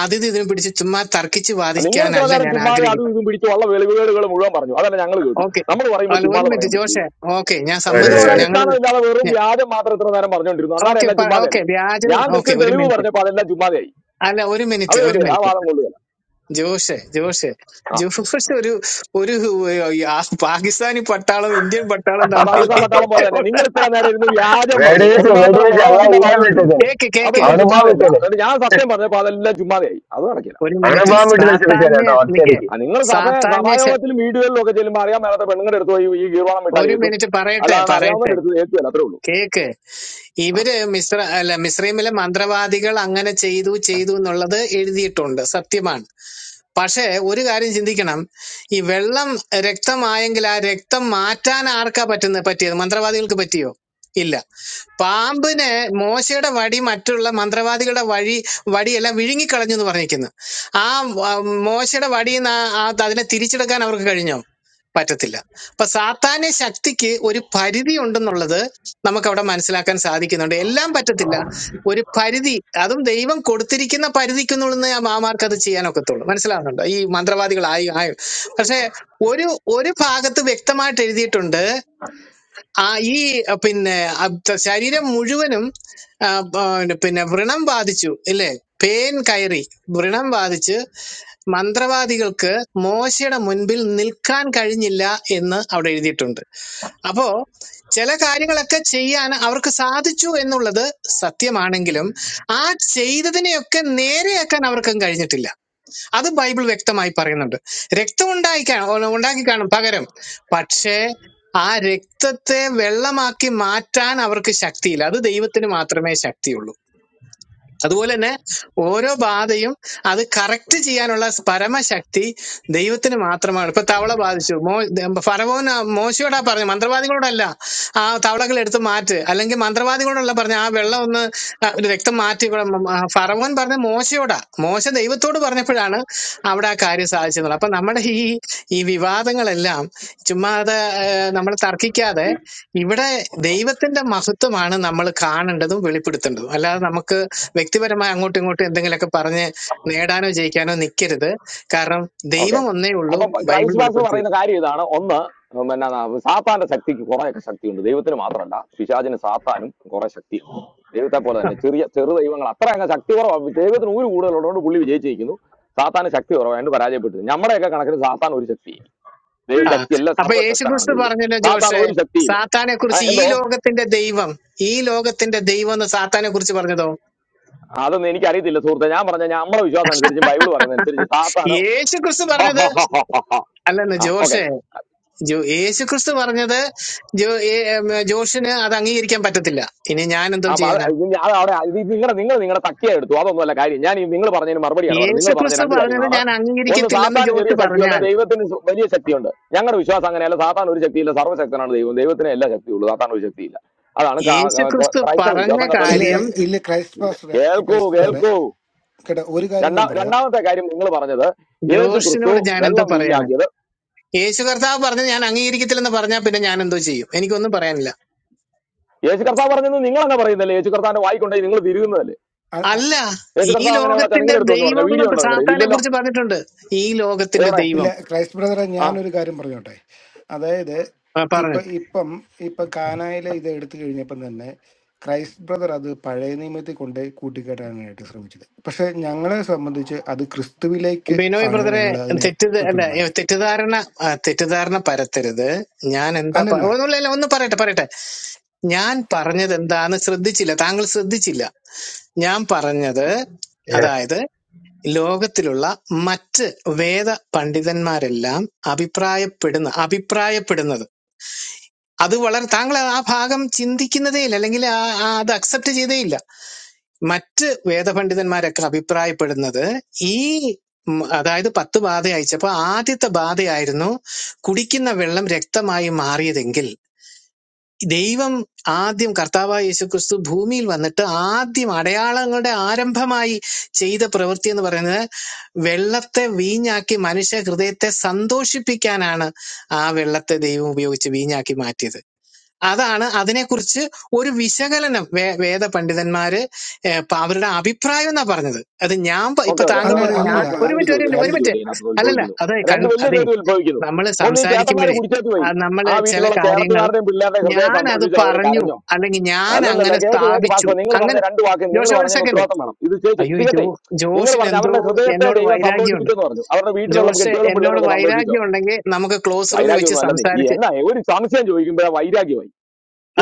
Speaker 6: അതിഥി ഇതിനെ പിടിച്ച് ചുമ്മാ തർക്കിച്ച്
Speaker 4: നിങ്ങൾ ഇത്ര
Speaker 6: വാദിക്കാനല്ല
Speaker 4: നേരം
Speaker 6: ഞാൻ
Speaker 4: ചുമ്മാതെ അതും
Speaker 6: ആഗ്രഹിക്കുന്നത്
Speaker 4: ഇതും പിടിച്ച് ഉള്ള വെളിവുകേടുകൾ മുഴുവൻ പറഞ്ഞു അതല്ല ഞങ്ങൾ കേട്ടു
Speaker 6: ഓക്കെ
Speaker 4: നമ്മൾ പറയുമ്പോൾ
Speaker 6: അല്ല ഒരു
Speaker 4: ചുമ്മാതെ പറയാൻ
Speaker 6: മിനിറ്റ്
Speaker 4: പറ്റും
Speaker 6: ജോഷെ ഓക്കെ ഞാൻ
Speaker 4: നിങ്ങൾ
Speaker 8: വെടിവെച്ച്
Speaker 6: സമ്മതിച്ചു
Speaker 8: വെടി-
Speaker 6: ഞങ്ങൾ
Speaker 4: ഒരടിസ്ഥാനമില്ലാതെ വെറും വ്യാജം മാത്രം ഇത്ര നേരം പറഞ്ഞുകൊണ്ടിരുന്നു അന്നാരം
Speaker 6: ഓക്കെ
Speaker 4: എല്ലാം
Speaker 6: ഓക്കെ
Speaker 4: ചുമ്മാതെയല്ല
Speaker 6: വ്യാജവും
Speaker 4: ഞാൻ
Speaker 6: ഓക്കെ
Speaker 4: കൃത്യം
Speaker 6: ഒരു
Speaker 4: തെളിവ്
Speaker 6: മിനിറ്റ്
Speaker 4: പറഞ്ഞപ്പോൾ അതെല്ലാം ചുമ്മാതെയായി
Speaker 6: അല്ല ഒരു
Speaker 4: അത്
Speaker 6: മിനിറ്റ് ഒരു
Speaker 4: കൊള്ളിയല്ല ആ
Speaker 6: മിനിറ്റ്
Speaker 4: വാദം കൊള്ളുക
Speaker 6: ജോഷെ ജോഷെ
Speaker 4: ആ
Speaker 6: ജോഷ് ഒരു ഒരു ആ പാകിസ്ഥാനി പട്ടാളം ഇന്ത്യൻ പട്ടാളം
Speaker 4: ആ
Speaker 6: തമ്മിൽ
Speaker 4: പാകിസ്ഥാൻ പട്ടാളം പോലെ തന്നെ നിങ്ങൾ ഇത്ര നേരം ഇരുന്ന് വ്യാജം പറഞ്ഞു
Speaker 8: വെടിവെച്ച്
Speaker 4: ഒന്നാം തരം
Speaker 8: വെടിവെച്ച്
Speaker 4: നുണ
Speaker 8: അല്ല
Speaker 4: തന്നെ
Speaker 8: എല്ലാം
Speaker 4: പറഞ്ഞുകൊണ്ടിരുന്നു
Speaker 8: വെച്ചത്
Speaker 6: കേക്ക് കേക്ക്
Speaker 4: അതൊന്നും
Speaker 8: അണുബാം
Speaker 4: ചുമ്മാതെയല്ല
Speaker 8: വിട്ടത്
Speaker 4: എന്നിട്ട് ഞാൻ സത്യം പറഞ്ഞപ്പോൾ അതെല്ലാം ചുമ്മാതെയായി അത് നടക്കില്ല
Speaker 6: ഒരു മിനിറ്റ്
Speaker 8: അണുബാം വിട്ട് നശിപ്പിച്ചത്
Speaker 6: സാത്താന്യ
Speaker 8: കേട്ടോ
Speaker 6: നിക്കേ
Speaker 8: ഒറ്റയടിക്ക്
Speaker 4: ആ നിങ്ങൾ സഭ
Speaker 6: സാത്താന്യ ശ-
Speaker 4: സഭായോഗത്തിലും വീടുകളിലും ഒക്കെ ചെല്ലുമ്പോൾ അറിയാൻ മേലാത്ത പെണ്ണുങ്ങളുടെ അടുത്ത് പോയി ഈ ഗീർവാണം വിട്ടാൽ
Speaker 6: ഒരു
Speaker 4: ഏൽക്കും
Speaker 6: മിനിറ്റ് പറയട്ടെ
Speaker 4: അല്ലാതെ
Speaker 6: പറയട്ടെ
Speaker 4: അറിയാവുന്നതിന്റെ അടുത്ത് ഏൽക്കുകയല്ല അത്രേ ഉള്ളൂ
Speaker 6: കേക്ക്
Speaker 4: ആ
Speaker 6: ഇവര് മിശ്ര അല്ല മിശ്രീമിലെ മന്ത്രവാദികൾ അങ്ങനെ ചെയ്തു ചെയ്തു എന്നുള്ളത് എഴുതിയിട്ടുണ്ട് സത്യമാണ് പക്ഷേ ഒരു കാര്യം ചിന്തിക്കണം ഈ വെള്ളം രക്തമായെങ്കിൽ ആ രക്തം മാറ്റാൻ ആർക്കാ പറ്റുന്നത് പറ്റിയത് മന്ത്രവാദികൾക്ക് പറ്റിയോ ഇല്ല പാമ്പിന് മോശയുടെ വടി മറ്റുള്ള മന്ത്രവാദികളുടെ വഴി വടിയെല്ലാം വിഴുങ്ങിക്കളഞ്ഞു എന്ന് പറഞ്ഞിരിക്കുന്നു ആ വ- മോശയുടെ വടിയിൽ നിന്ന് അതിനെ തിരിച്ചെടുക്കാൻ അവർക്ക് കഴിഞ്ഞോ പറ്റത്തില്ല അപ്പൊ സാത്താന്യ ശക്തിക്ക് ഒരു പരിധി ഉണ്ടെന്നുള്ളത് നമുക്ക് അവിടെ മനസ്സിലാക്കാൻ സാധിക്കുന്നുണ്ട് എല്ലാം പറ്റത്തില്ല ഒരു പരിധി അതും ദൈവം കൊടുത്തിരിക്കുന്ന പരിധിക്കുള്ളിൽ ആ മാമാർക്ക് അത് ചെയ്യാനൊക്കത്തുള്ളൂ മനസ്സിലാവുന്നുണ്ടോ ഈ മന്ത്രവാദികളായി ആയി പക്ഷെ ഒരു ഒരു ഭാഗത്ത് വ്യക്തമായിട്ട് എഴുതിയിട്ടുണ്ട് ആ ഈ അഹ് പിന്നെ അഹ് ത- ശരീരം മുഴുവനും ആ, ആ, പിന്നെ വ്രണം ബാധിച്ചു ഇല്ലേ പേൻ കയറി വ്രണം ബാധിച്ച് മന്ത്രവാദികൾക്ക് മോശയുടെ മുൻപിൽ നിൽക്കാൻ കഴിഞ്ഞില്ല എന്ന് അവിടെ എഴുതിയിട്ടുണ്ട് അപ്പോ ചില കാര്യങ്ങളൊക്കെ ചെയ്യാൻ അവർക്ക് സാധിച്ചു എന്നുള്ളത് സത്യമാണെങ്കിലും ആ ചെയ്തതിനെയൊക്കെ നേരെയാക്കാൻ അവർക്കും കഴിഞ്ഞിട്ടില്ല അത് ബൈബിൾ വ്യക്തമായി പറയുന്നുണ്ട് രക്തം ഉണ്ടായി കാ- ഉണ്ടാക്കി കാണും പകരം പക്ഷേ ആ രക്തത്തെ വെള്ളമാക്കി മാറ്റാൻ അവർക്ക് ശക്തിയില്ല അത് ദൈവത്തിന് മാത്രമേ ശക്തിയുള്ളൂ അതുപോലെ തന്നെ ഓരോ ബാധയും അത് കറക്റ്റ് ചെയ്യാനുള്ള പരമശക്തി ദൈവത്തിന് മാത്രമാണ് ഇപ്പൊ തവള ബാധിച്ചു മോ ഫറവോൻ മോശയോടാ പറഞ്ഞു മന്ത്രവാദികളോടല്ല ആ തവളകൾ എടുത്ത് മാറ്റ് അല്ലെങ്കിൽ മന്ത്രവാദികളോടല്ല പറഞ്ഞു ആ വെള്ളം ഒന്ന് ആ, ഒരു രക്തം മാറ്റി ഇവിടെ മ- ആ ഫറവോൻ പറഞ്ഞ മോശയോടാ മോശ ദൈവത്തോട് പറഞ്ഞപ്പോഴാണ് അവിടെ ആ കാര്യം സാധിച്ചത് അപ്പൊ നമ്മുടെ ഈ ഈ വിവാദങ്ങളെല്ലാം ചുമ്മാതെ ഏഹ്, നമ്മൾ തർക്കിക്കാതെ ഇവിടെ ദൈവത്തിന്റെ മഹത്വമാണ് നമ്മൾ കാണേണ്ടതും വെളിപ്പെടുത്തേണ്ടതും അല്ലാതെ നമുക്ക് വ്യക്തിപരമായി അങ്ങോട്ടും ഇങ്ങോട്ടും എന്തെങ്കിലുമൊക്കെ പറഞ്ഞ് നേടാനോ ജയിക്കാനോ നിൽക്കരുത് കാരണം
Speaker 4: ഓക്കെ
Speaker 6: ദൈവം ഒന്നേ ഉള്ളൂ
Speaker 4: അപ്പം
Speaker 6: ബൈബിൾ
Speaker 4: ക്രൈസ്റ്റ് പാസ്റ്റർ
Speaker 6: വെളിപ്പെടുത്തി
Speaker 4: പറയുന്ന കാര്യം ഇതാണ് ഒന്ന് ഉം, പിന്നെ സാത്താന്റെ ശക്തിക്ക് കുറേയൊക്കെ ശക്തിയുണ്ട് ദൈവത്തിന് മാത്രമല്ല പിശാചിന് സാത്താനും കുറെ ശക്തിയുണ്ട് ദൈവത്തെ പോലെ
Speaker 6: ആ
Speaker 4: തന്നെ ചെറിയ ചെറു ദൈവങ്ങൾ അത്ര അങ്ങ് ശക്തി കുറവാണ് ദൈവത്തിന് ഒരു കൂടുതലുള്ളതുകൊണ്ട് പുള്ളി വിജയിച്ചിരിക്കുന്നു സാത്താന് ശക്തി കുറവായതുകൊണ്ട് പരാജയപ്പെട്ടു നമ്മുടെയൊക്കെ കണക്കിന് സാത്താൻ ഒരു ശക്തിയില്ല ദൈവ
Speaker 6: ആ.
Speaker 4: ശക്തി എല്ലാം
Speaker 6: അപ്പൊ
Speaker 4: സർവ്വശക്തനാണ്
Speaker 6: യേശുക്രിസ്തു
Speaker 4: ദൈവം
Speaker 6: പറഞ്ഞല്ലോ
Speaker 4: സാത്താൻ
Speaker 6: ജോഷെ
Speaker 4: ഒരു ശക്തിയില്ല
Speaker 6: സാത്താനെ
Speaker 4: ആ,
Speaker 6: കുറിച്ച് ഈ
Speaker 4: എന്തോ
Speaker 6: ലോകത്തിന്റെ ദൈവം ഈ ലോകത്തിന്റെ ദൈവം എന്ന് സാത്താനെ കുറിച്ച് പറഞ്ഞതോ
Speaker 4: അതൊന്നും എനിക്ക് അറിയത്തില്ല സുഹൃത്തെ ഞാൻ പറഞ്ഞ ഞാൻ നമ്മുടെ വിശ്വാസം അനുസരിച്ച് ബൈബിൾ പറയുന്ന അനുസരിച്ച് സാത്താന്
Speaker 6: യേശുക്രിസ്തു
Speaker 4: ഹ
Speaker 6: പറഞ്ഞത്
Speaker 4: ഹ ഹ ഹ ഹ ഹ.
Speaker 6: അല്ലെന്ന്
Speaker 4: ആ ഓക്കെ
Speaker 6: ജോഷെ ജോ യേശുക്രിസ്തു പറഞ്ഞത് ജോ ഏ- ഉം, ജോഷിന് അത് അംഗീകരിക്കാൻ പറ്റത്തില്ല ഇനി ഞാൻ എന്തോ
Speaker 4: അപ്പൊ അത്
Speaker 6: ചെയ്യാനാ
Speaker 4: ഇത് ഞാൻ അവിടെ ഇത് നിങ്ങളുടെ നിങ്ങൾ നിങ്ങളുടെ തക്കിയ എടുത്തു അതൊന്നുമല്ല കാര്യം ഞാൻ നിങ്ങൾ പറഞ്ഞതിന് മറുപടിയാണ് പറഞ്ഞത് നിങ്ങൾ പറഞ്ഞ
Speaker 6: യേശുക്രിസ്തു
Speaker 4: രണ്ട്
Speaker 6: പറഞ്ഞത്
Speaker 4: കാര്യങ്ങളാണ്
Speaker 6: ഞാൻ
Speaker 4: ഒന്ന്
Speaker 6: അംഗീകരിക്കത്തില്ലെന്ന്
Speaker 4: സാത്താന് ചെറിയ
Speaker 6: ജോഷ്
Speaker 4: ശക്തിയുണ്ട്
Speaker 6: പറഞ്ഞാൽ
Speaker 4: ദൈവത്തിന് സു- വലിയ ശക്തിയുണ്ട് ഞങ്ങളുടെ വിശ്വാസം അങ്ങനെയല്ല സാത്താൻ ഒരു ശക്തിയില്ല സർവ്വശക്തനാണ് ദൈവം ദൈവത്തിന് എല്ലാ ശക്തിയുള്ളൂ സാത്താൻ ഒരു ശക്തിയില്ല അതാണ് ക- ക- ക-
Speaker 6: യേശുക്രിസ്തു
Speaker 4: ക്രൈസ്തവ
Speaker 6: പറഞ്ഞ
Speaker 4: വിശ്വാസം കത്തോലിക്ക
Speaker 1: ഇല്ല
Speaker 6: കാര്യം
Speaker 4: വിശ്വാസം
Speaker 1: ഇല്ല ക്രൈസ്റ്റ് പാസ്റ്ററെ
Speaker 4: കേൾക്കൂ
Speaker 1: ക്രൈസ്റ്റ് പാസ്റ്ററെ
Speaker 4: കേൾക്കൂ
Speaker 1: കേട്ടോ ഒരു കാര്യം
Speaker 4: രണ്ടാ
Speaker 1: ഞാൻ പറയാം
Speaker 4: രണ്ടാമത്തെ കാര്യം നിങ്ങൾ പറഞ്ഞത് യേശു ക്രിസ്തു
Speaker 6: ജോഷിനോട് ഞാൻ എന്തോ
Speaker 4: വെള്ളം
Speaker 6: പറയാണ്
Speaker 4: വീഞ്ഞാക്കിയത്
Speaker 6: യേശു കർത്താവ് പറഞ്ഞു ഞാൻ അംഗീകരിക്കത്തില്ലെന്ന് പറഞ്ഞാൽ പിന്നെ ഞാൻ എന്തോ ചെയ്യും എനിക്കൊന്നും പറയാനില്ല
Speaker 4: യേശു കർത്താവ് പറഞ്ഞത് നിങ്ങൾ അങ്ങനെ പറയുന്നില്ലേ യേശു കർത്താവിന്റെ വായിക്കൊണ്ടേ നിങ്ങൾ തിരുകുന്നതല്ലേ
Speaker 6: അല്ല
Speaker 4: യേശു
Speaker 6: ഈ
Speaker 4: കർത്താവ് അങ്ങനെ എവിടെ
Speaker 6: ലോകത്തിന്റെ
Speaker 4: നിങ്ങൾ എടുത്തു എന്ന് പറഞ്ഞ
Speaker 6: ദൈവം
Speaker 4: വീഡിയോ
Speaker 6: എന്ന്
Speaker 4: ഉണ്ടോ നിങ്ങളുടെ
Speaker 6: സാത്താനെ
Speaker 4: ഇല്ലല്ലോ
Speaker 6: കുറിച്ച് പറഞ്ഞിട്ടുണ്ട് ഈ ലോകത്തിന്റെ
Speaker 4: എവിടെ
Speaker 1: ഇല്ല
Speaker 6: ദൈവം
Speaker 1: ക്രൈസ്റ്റ് ബ്രദറെ
Speaker 4: ആ
Speaker 1: ഞാനൊരു കാര്യം പറഞ്ഞോട്ടെ അതായത്
Speaker 6: ആ,
Speaker 1: ഇപ്പൊ
Speaker 6: പറഞ്ഞു
Speaker 1: ഇപ്പം ഇപ്പൊ കാനായിലെ ഇത് എടുത്തു കഴിഞ്ഞപ്പം തന്നെ ക്രൈസ്റ്റ് ബ്രദർ അത് പഴയ നിയമത്തിൽ കൊണ്ട് കൂട്ടിക്കെട്ടാനായിട്ട് ശ്രമിച്ചത് പക്ഷെ ഞങ്ങളെ സംബന്ധിച്ച് അത് ക്രിസ്തുവിലേക്ക്
Speaker 6: ബിനോയ്
Speaker 1: ആണ്
Speaker 6: ബ്രദറെ
Speaker 1: ഞങ്ങൾ അതിനെ
Speaker 6: തെറ്റി അല്ല ഏ,
Speaker 1: ഉൾപ്പെടുന്നത്
Speaker 6: തെറ്റിദ്ധാരണ ആ, തെറ്റിദ്ധാരണ പരത്തരുത് ഞാൻ എന്താ പ-
Speaker 1: അല്ലല്ല
Speaker 6: ഒന്നുമില്ല ഇല്ല, ഒന്ന് പറയട്ടെ പറയട്ടെ ഞാൻ പറഞ്ഞത് എന്താന്ന് ശ്രദ്ധിച്ചില്ല താങ്കൾ ശ്രദ്ധിച്ചില്ല ഞാൻ പറഞ്ഞത്
Speaker 8: യെസ്
Speaker 6: അതായത് ലോകത്തിലുള്ള മറ്റ് വേദ പണ്ഡിതന്മാരെല്ലാം അഭിപ്രായപ്പെടുന്ന അഭിപ്രായപ്പെടുന്നത് അത് വളരെ താങ്കൾ ആ ഭാഗം ചിന്തിക്കുന്നതേ ഇല്ല അല്ലെങ്കിൽ ആ- ആ അത് അക്സെപ്റ്റ് ചെയ്തേ ഇല്ല മറ്റ് വേദപണ്ഡിതന്മാരൊക്കെ അഭിപ്രായപ്പെടുന്നത് ഈ ഉം, അതായത് പത്ത് ബാധ അയച്ചപ്പോ ആദ്യത്തെ ബാധയായിരുന്നു കുടിക്കുന്ന വെള്ളം രക്തമായി മാറിയതെങ്കിൽ ദൈവം ആദ്യം കർത്താവായ യേശുക്രിസ്തു ഭൂമിയിൽ വന്നിട്ട് ആദ്യം അടയാളങ്ങളുടെ ആരംഭമായി ചെയ്ത പ്രവൃത്തി എന്ന് പറയുന്നത് വെള്ളത്തെ വീഞ്ഞാക്കി മനുഷ്യ ഹൃദയത്തെ സന്തോഷിപ്പിക്കാനാണ് ആ വെള്ളത്തെ ദൈവം ഉപയോഗിച്ച് വീഞ്ഞാക്കി മാറ്റിയത് അതാണ് അതിനെക്കുറിച്ച് ഒരു വിശകലനം വേ വേദ പണ്ഡിതന്മാര് ഏഹ്, പ- അവരുടെ അഭിപ്രായം എന്നാ പറഞ്ഞത് അത് ഞാൻ പ-
Speaker 4: ഓക്കെ
Speaker 6: ഇപ്പൊ
Speaker 4: ഓക്കെ
Speaker 6: താങ്കൾ
Speaker 1: അല്ല
Speaker 6: പറഞ്ഞു ഞാൻ
Speaker 1: അല്ലല്ല
Speaker 4: പാസ്റ്റർ
Speaker 6: ഒരു
Speaker 4: രണ്ട്
Speaker 6: മിനിറ്റ്
Speaker 1: അ-
Speaker 6: ഒരു
Speaker 4: ചോദ്യം
Speaker 6: മിനിറ്റ് ഒരു
Speaker 4: രണ്ട്
Speaker 1: ക്രൈസ്റ്റ്
Speaker 6: മിനിറ്റ്
Speaker 4: ചോദ്യം ഇതിനകത്ത്
Speaker 6: അല്ലല്ല
Speaker 4: ഉത്ഭവിക്കുന്നു
Speaker 6: അതെ കൺ
Speaker 4: രണ്ട് വലിയ
Speaker 6: അതെ
Speaker 4: ചോദ്യം ഉത്ഭവിക്കുന്നു
Speaker 6: നമ്മൾ
Speaker 4: ഒന്ന് ഈ ചേട്ടന്മാര്
Speaker 6: സംസാരിക്കുമ്പോഴേ
Speaker 4: കുടിച്ചേത്ത്
Speaker 6: ആ,
Speaker 4: പോയി ആ
Speaker 6: നമ്മള് ചില
Speaker 4: വീട്ടിലുള്ള
Speaker 6: കാര്യങ്ങൾ
Speaker 4: ചേട്ടത്തിമാരുടെയും പിള്ളേരുടെയും ഹൃദയം
Speaker 6: ഞാൻ അത്
Speaker 4: സന്തോഷിച്ചു അവര്
Speaker 6: പറഞ്ഞു
Speaker 4: കരഞ്ഞോ
Speaker 6: അല്ലെങ്കിൽ ഞാൻ
Speaker 4: അല്ലല്ലല്ല
Speaker 6: അങ്ങനെ
Speaker 4: കേക്ക് കേക്ക്
Speaker 6: സ്ഥാപിച്ചു
Speaker 4: പാസ്റ്റർ നിങ്ങൾ പറഞ്ഞ
Speaker 6: അങ്ങനെ
Speaker 4: രണ്ട് വാക്ക്
Speaker 6: ജോഷ
Speaker 4: നിങ്ങൾ
Speaker 6: ഒരു
Speaker 4: പറഞ്ഞതിന്
Speaker 6: സെക്കൻഡ്
Speaker 4: ഉത്തരവാദിത്തം വേണം ഇത് ചേച്ചി
Speaker 6: അയ്യോ
Speaker 4: ഇത്
Speaker 6: ഈ ജോ
Speaker 4: കേട്ടെ നിങ്ങൾ
Speaker 6: ജോഷിന്
Speaker 4: പറഞ്ഞ
Speaker 6: എന്തോ
Speaker 4: അവരുടെ ഹൃദയത്തെ
Speaker 6: എന്നോട്
Speaker 4: ദൈവം
Speaker 6: വൈരാഗ്യമുണ്ട്
Speaker 4: സന്തോഷിപ്പിച്ചെന്ന് പറഞ്ഞു അവരുടെ വീട്ടിലുള്ള
Speaker 6: ജോഷ്
Speaker 4: കെട്ടികളും പിള്ളേരും
Speaker 6: എന്നോട്
Speaker 4: ഒക്കെ സന്തോഷിച്ചോ
Speaker 6: വൈരാഗ്യം ഉണ്ടെങ്കിൽ നമുക്ക് ക്ലോസ് റൂമിൽ വെച്ച്
Speaker 4: വൈരാഗ്യമൊന്നും അല്ലെന്നേ ഈ
Speaker 6: സംസാരിച്ച്
Speaker 4: എന്നാ ഒരു സംശയം ചോദിക്കുമ്പോഴാ വൈരാഗ്യമായി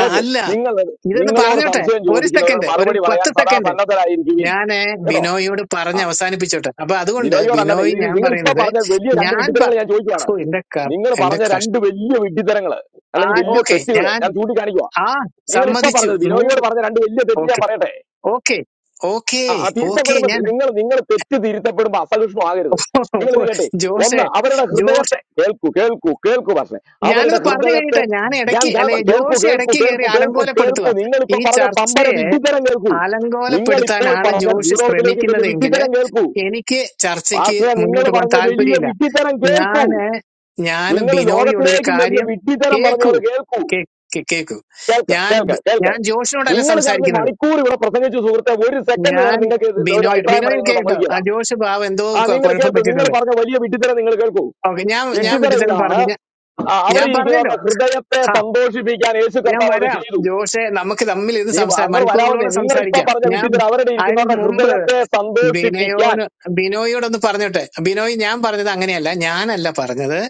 Speaker 6: ആ, അല്ല
Speaker 4: നിങ്ങൾ
Speaker 6: ഇതൊന്ന്
Speaker 4: നിങ്ങളോട്
Speaker 6: പറഞ്ഞോട്ടെ
Speaker 4: സംശയം
Speaker 6: ഒരു
Speaker 4: ചോദിക്കുന്നവരോട്
Speaker 6: സെക്കൻഡ് ഒരു
Speaker 4: മറുപടി പറയാൻ
Speaker 6: പത്ത്
Speaker 4: സദാ
Speaker 6: സെക്കൻഡ്
Speaker 4: സന്നദ്ധരായിരിക്കുവിൻ
Speaker 6: ഞാൻ
Speaker 4: കേട്ടോ
Speaker 6: ബിനോയിയോട്
Speaker 4: ആ
Speaker 6: പറഞ്ഞ് അവസാനിപ്പിച്ചോട്ടെ അപ്പൊ അതുകൊണ്ട്
Speaker 4: ബിനോയോടല്ലാതെ
Speaker 6: ബിനോയ്
Speaker 4: ഇത് ഇത്
Speaker 6: ഞാൻ
Speaker 4: നിങ്ങൾ ഇപ്പൊ
Speaker 6: പറയുന്നത്
Speaker 4: പറഞ്ഞ വലിയ രണ്ട്
Speaker 6: ഞാൻ
Speaker 4: വിഡ്ഢിത്തരങ്ങൾ
Speaker 6: പ-
Speaker 4: ഞാൻ ചോദിക്കുവാണ്
Speaker 6: ഓ എന്റെ കർ
Speaker 4: നിങ്ങൾ
Speaker 6: എന്റെ
Speaker 4: പറഞ്ഞ
Speaker 6: കഷ്ട
Speaker 4: രണ്ട് വലിയ വിഡ്ഢിത്തരങ്ങൾ
Speaker 6: ആ
Speaker 4: അല്ലെങ്കിൽ വലിയ
Speaker 6: ഓക്കെ
Speaker 4: തെറ്റുകൾ
Speaker 6: ഞാൻ
Speaker 4: ഞാൻ ചൂണ്ടിക്കാണിക്കുക
Speaker 6: ആ
Speaker 4: നിങ്ങൾ ഇപ്പൊ
Speaker 6: സമ്മതിച്ചു
Speaker 4: പറഞ്ഞത് ബിനോയോട്
Speaker 6: നൂറ്
Speaker 4: പറഞ്ഞ രണ്ട് വലിയ തെറ്റ് ഞാൻ
Speaker 6: ഓക്കെ
Speaker 4: പറയട്ടെ
Speaker 6: ഓക്കെ ഓക്കേ
Speaker 4: ആ ആ തിരുത്തപ്പെടുമ്പോ
Speaker 6: ഓക്കേ
Speaker 4: നിങ്ങൾ നിങ്ങൾ തെറ്റ് തിരുത്തപ്പെടുമ്പോ അസഹിഷ്ണുവാകരുത് നിങ്ങൾ ഇത് കേട്ടെ
Speaker 6: ജോഷെ
Speaker 4: ഒന്ന് അവരുടെ
Speaker 6: ജോഷ്
Speaker 4: ഹൃദയത്തെ കേൾക്കൂ കേൾക്കൂ കേൾക്കൂ പക്ഷേ അവരുടെ
Speaker 6: ഞാനൊന്ന് പറഞ്ഞു
Speaker 4: ഹൃദയത്തെ
Speaker 6: കഴിയട്ടെ ഞാൻ
Speaker 4: ഞാൻ
Speaker 6: ഇടയ്ക്ക്
Speaker 4: ഞാൻ
Speaker 6: അല്ലെ
Speaker 4: കേൾക്കൂ
Speaker 6: ജോഷ്
Speaker 4: കേൾക്കൂ
Speaker 6: ഇടയ്ക്ക് കയറി
Speaker 4: കേൾക്കൂ കേൾക്കൂ
Speaker 6: അലങ്കോലപ്പെടുത്തുക
Speaker 4: കേൾക്കൂ നിങ്ങൾ ഇപ്പൊ
Speaker 6: ഈ
Speaker 4: പറഞ്ഞ പമ്പര
Speaker 6: ചർച്ചയെ
Speaker 4: വിഡ്ഢിത്തരം കേൾക്കൂ നിങ്ങൾ ഇപ്പോൾ
Speaker 6: അലങ്കോലപ്പെടുത്താനാണ്
Speaker 4: പറഞ്ഞ
Speaker 6: ജോഷ്
Speaker 4: ഭൂലോകത്തിലേക്കും വലിയ
Speaker 6: ശ്രമിക്കുന്നതെങ്കിൽ
Speaker 4: വിഡ്ഢിത്തരം കേൾക്കൂ
Speaker 6: എനിക്ക് ചർച്ചയ്ക്ക്
Speaker 4: പാസ്റ്ററെ നിങ്ങൾ
Speaker 6: മുന്നോട്ട് പോകാൻ
Speaker 4: പറഞ്ഞ വലിയ
Speaker 6: താല്പര്യമില്ല
Speaker 4: വിട്ടിത്തരം കേൾക്കൂ
Speaker 6: ഞാന് ഞാൻ
Speaker 4: നിങ്ങൾ
Speaker 6: ബിനോയോട് ഒരു
Speaker 4: ലോകത്തിലേക്കും വലിയ
Speaker 6: കാര്യം
Speaker 4: വിട്ടിത്തരം പറഞ്ഞു
Speaker 6: കേക്കൂ
Speaker 4: അത് കേൾക്കൂ
Speaker 6: കേ- കേ- കേക്കൂ
Speaker 4: കേൾക്ക
Speaker 6: ഞാൻ
Speaker 4: കേൾക്ക
Speaker 6: ബി-
Speaker 4: കേൾക്ക
Speaker 6: ഞാൻ ജോഷിനോടല്ല
Speaker 4: നിങ്ങൾ കടന്ന്
Speaker 6: സംസാരിക്കുന്നത്
Speaker 4: മണിക്കൂർ ഇവിടെ പ്രസംഗിച്ചു സുഹൃത്തെ ഒരു സെക്കൻഡ്
Speaker 6: ഞാൻ
Speaker 4: നേരം നിങ്ങൾക്ക് ഇത് ഒരു
Speaker 6: ബിനോയോട്
Speaker 4: അഭിപ്രായം
Speaker 6: ബിനോയ്
Speaker 4: പറയാൻ നിങ്ങൾ
Speaker 6: കേട്ടോ ആ
Speaker 4: സമ്മതിക്കില്ല
Speaker 6: ജോഷ് ബാബു എന്തോ
Speaker 4: ആ
Speaker 6: കൊ-
Speaker 4: നിങ്ങൾ
Speaker 6: കുഴപ്പം
Speaker 4: കേൾക്കൂ നിങ്ങൾ
Speaker 6: പറ്റിയിട്ടുണ്ട്
Speaker 4: പറഞ്ഞ വലിയ വിട്ടിത്തരം നിങ്ങൾ കേൾക്കൂ
Speaker 6: ഓക്കെ ഞാൻ ഞാൻ
Speaker 4: വിട്ടിത്തരം
Speaker 6: വിട്ടിത്തരം
Speaker 4: ഇതാണ്
Speaker 6: പറഞ്ഞു ഞാൻ
Speaker 4: ആ, അവിടെ
Speaker 6: ഞാൻ പറഞ്ഞല്ലോ
Speaker 4: ഇരിക്കുന്നവരുടെ ഹൃദയത്തെ
Speaker 6: ഹാ
Speaker 4: സന്തോഷിപ്പിക്കാൻ യേശു
Speaker 6: ഞാൻ
Speaker 4: കർത്താവ് അത്
Speaker 6: വരാം
Speaker 4: ചെയ്തു
Speaker 6: ജോഷെ നമുക്ക് തമ്മിൽ ഇത്
Speaker 4: നീ
Speaker 6: സംസാ
Speaker 4: നിങ്ങൾ വരാവുന്നേ
Speaker 6: മണിക്കൂറുകളോളം
Speaker 4: നിങ്ങൾ ഇപ്പൊ
Speaker 6: സംസാരിക്കാം
Speaker 4: പറഞ്ഞ
Speaker 6: ഞാൻ
Speaker 4: വിട്ടിത്തരം അവരുടെ
Speaker 6: അതിന്
Speaker 4: ഇരിക്കുന്നവരുടെ
Speaker 6: മുമ്പ്
Speaker 4: ഹൃദയത്തെ
Speaker 6: ബിനോയോന്
Speaker 4: സന്തോഷിപ്പിക്കാൻ
Speaker 6: ബിനോയോടൊന്ന് പറഞ്ഞോട്ടെ ബിനോയ് ഞാൻ പറഞ്ഞത് അങ്ങനെയല്ല ഞാനല്ല പറഞ്ഞത്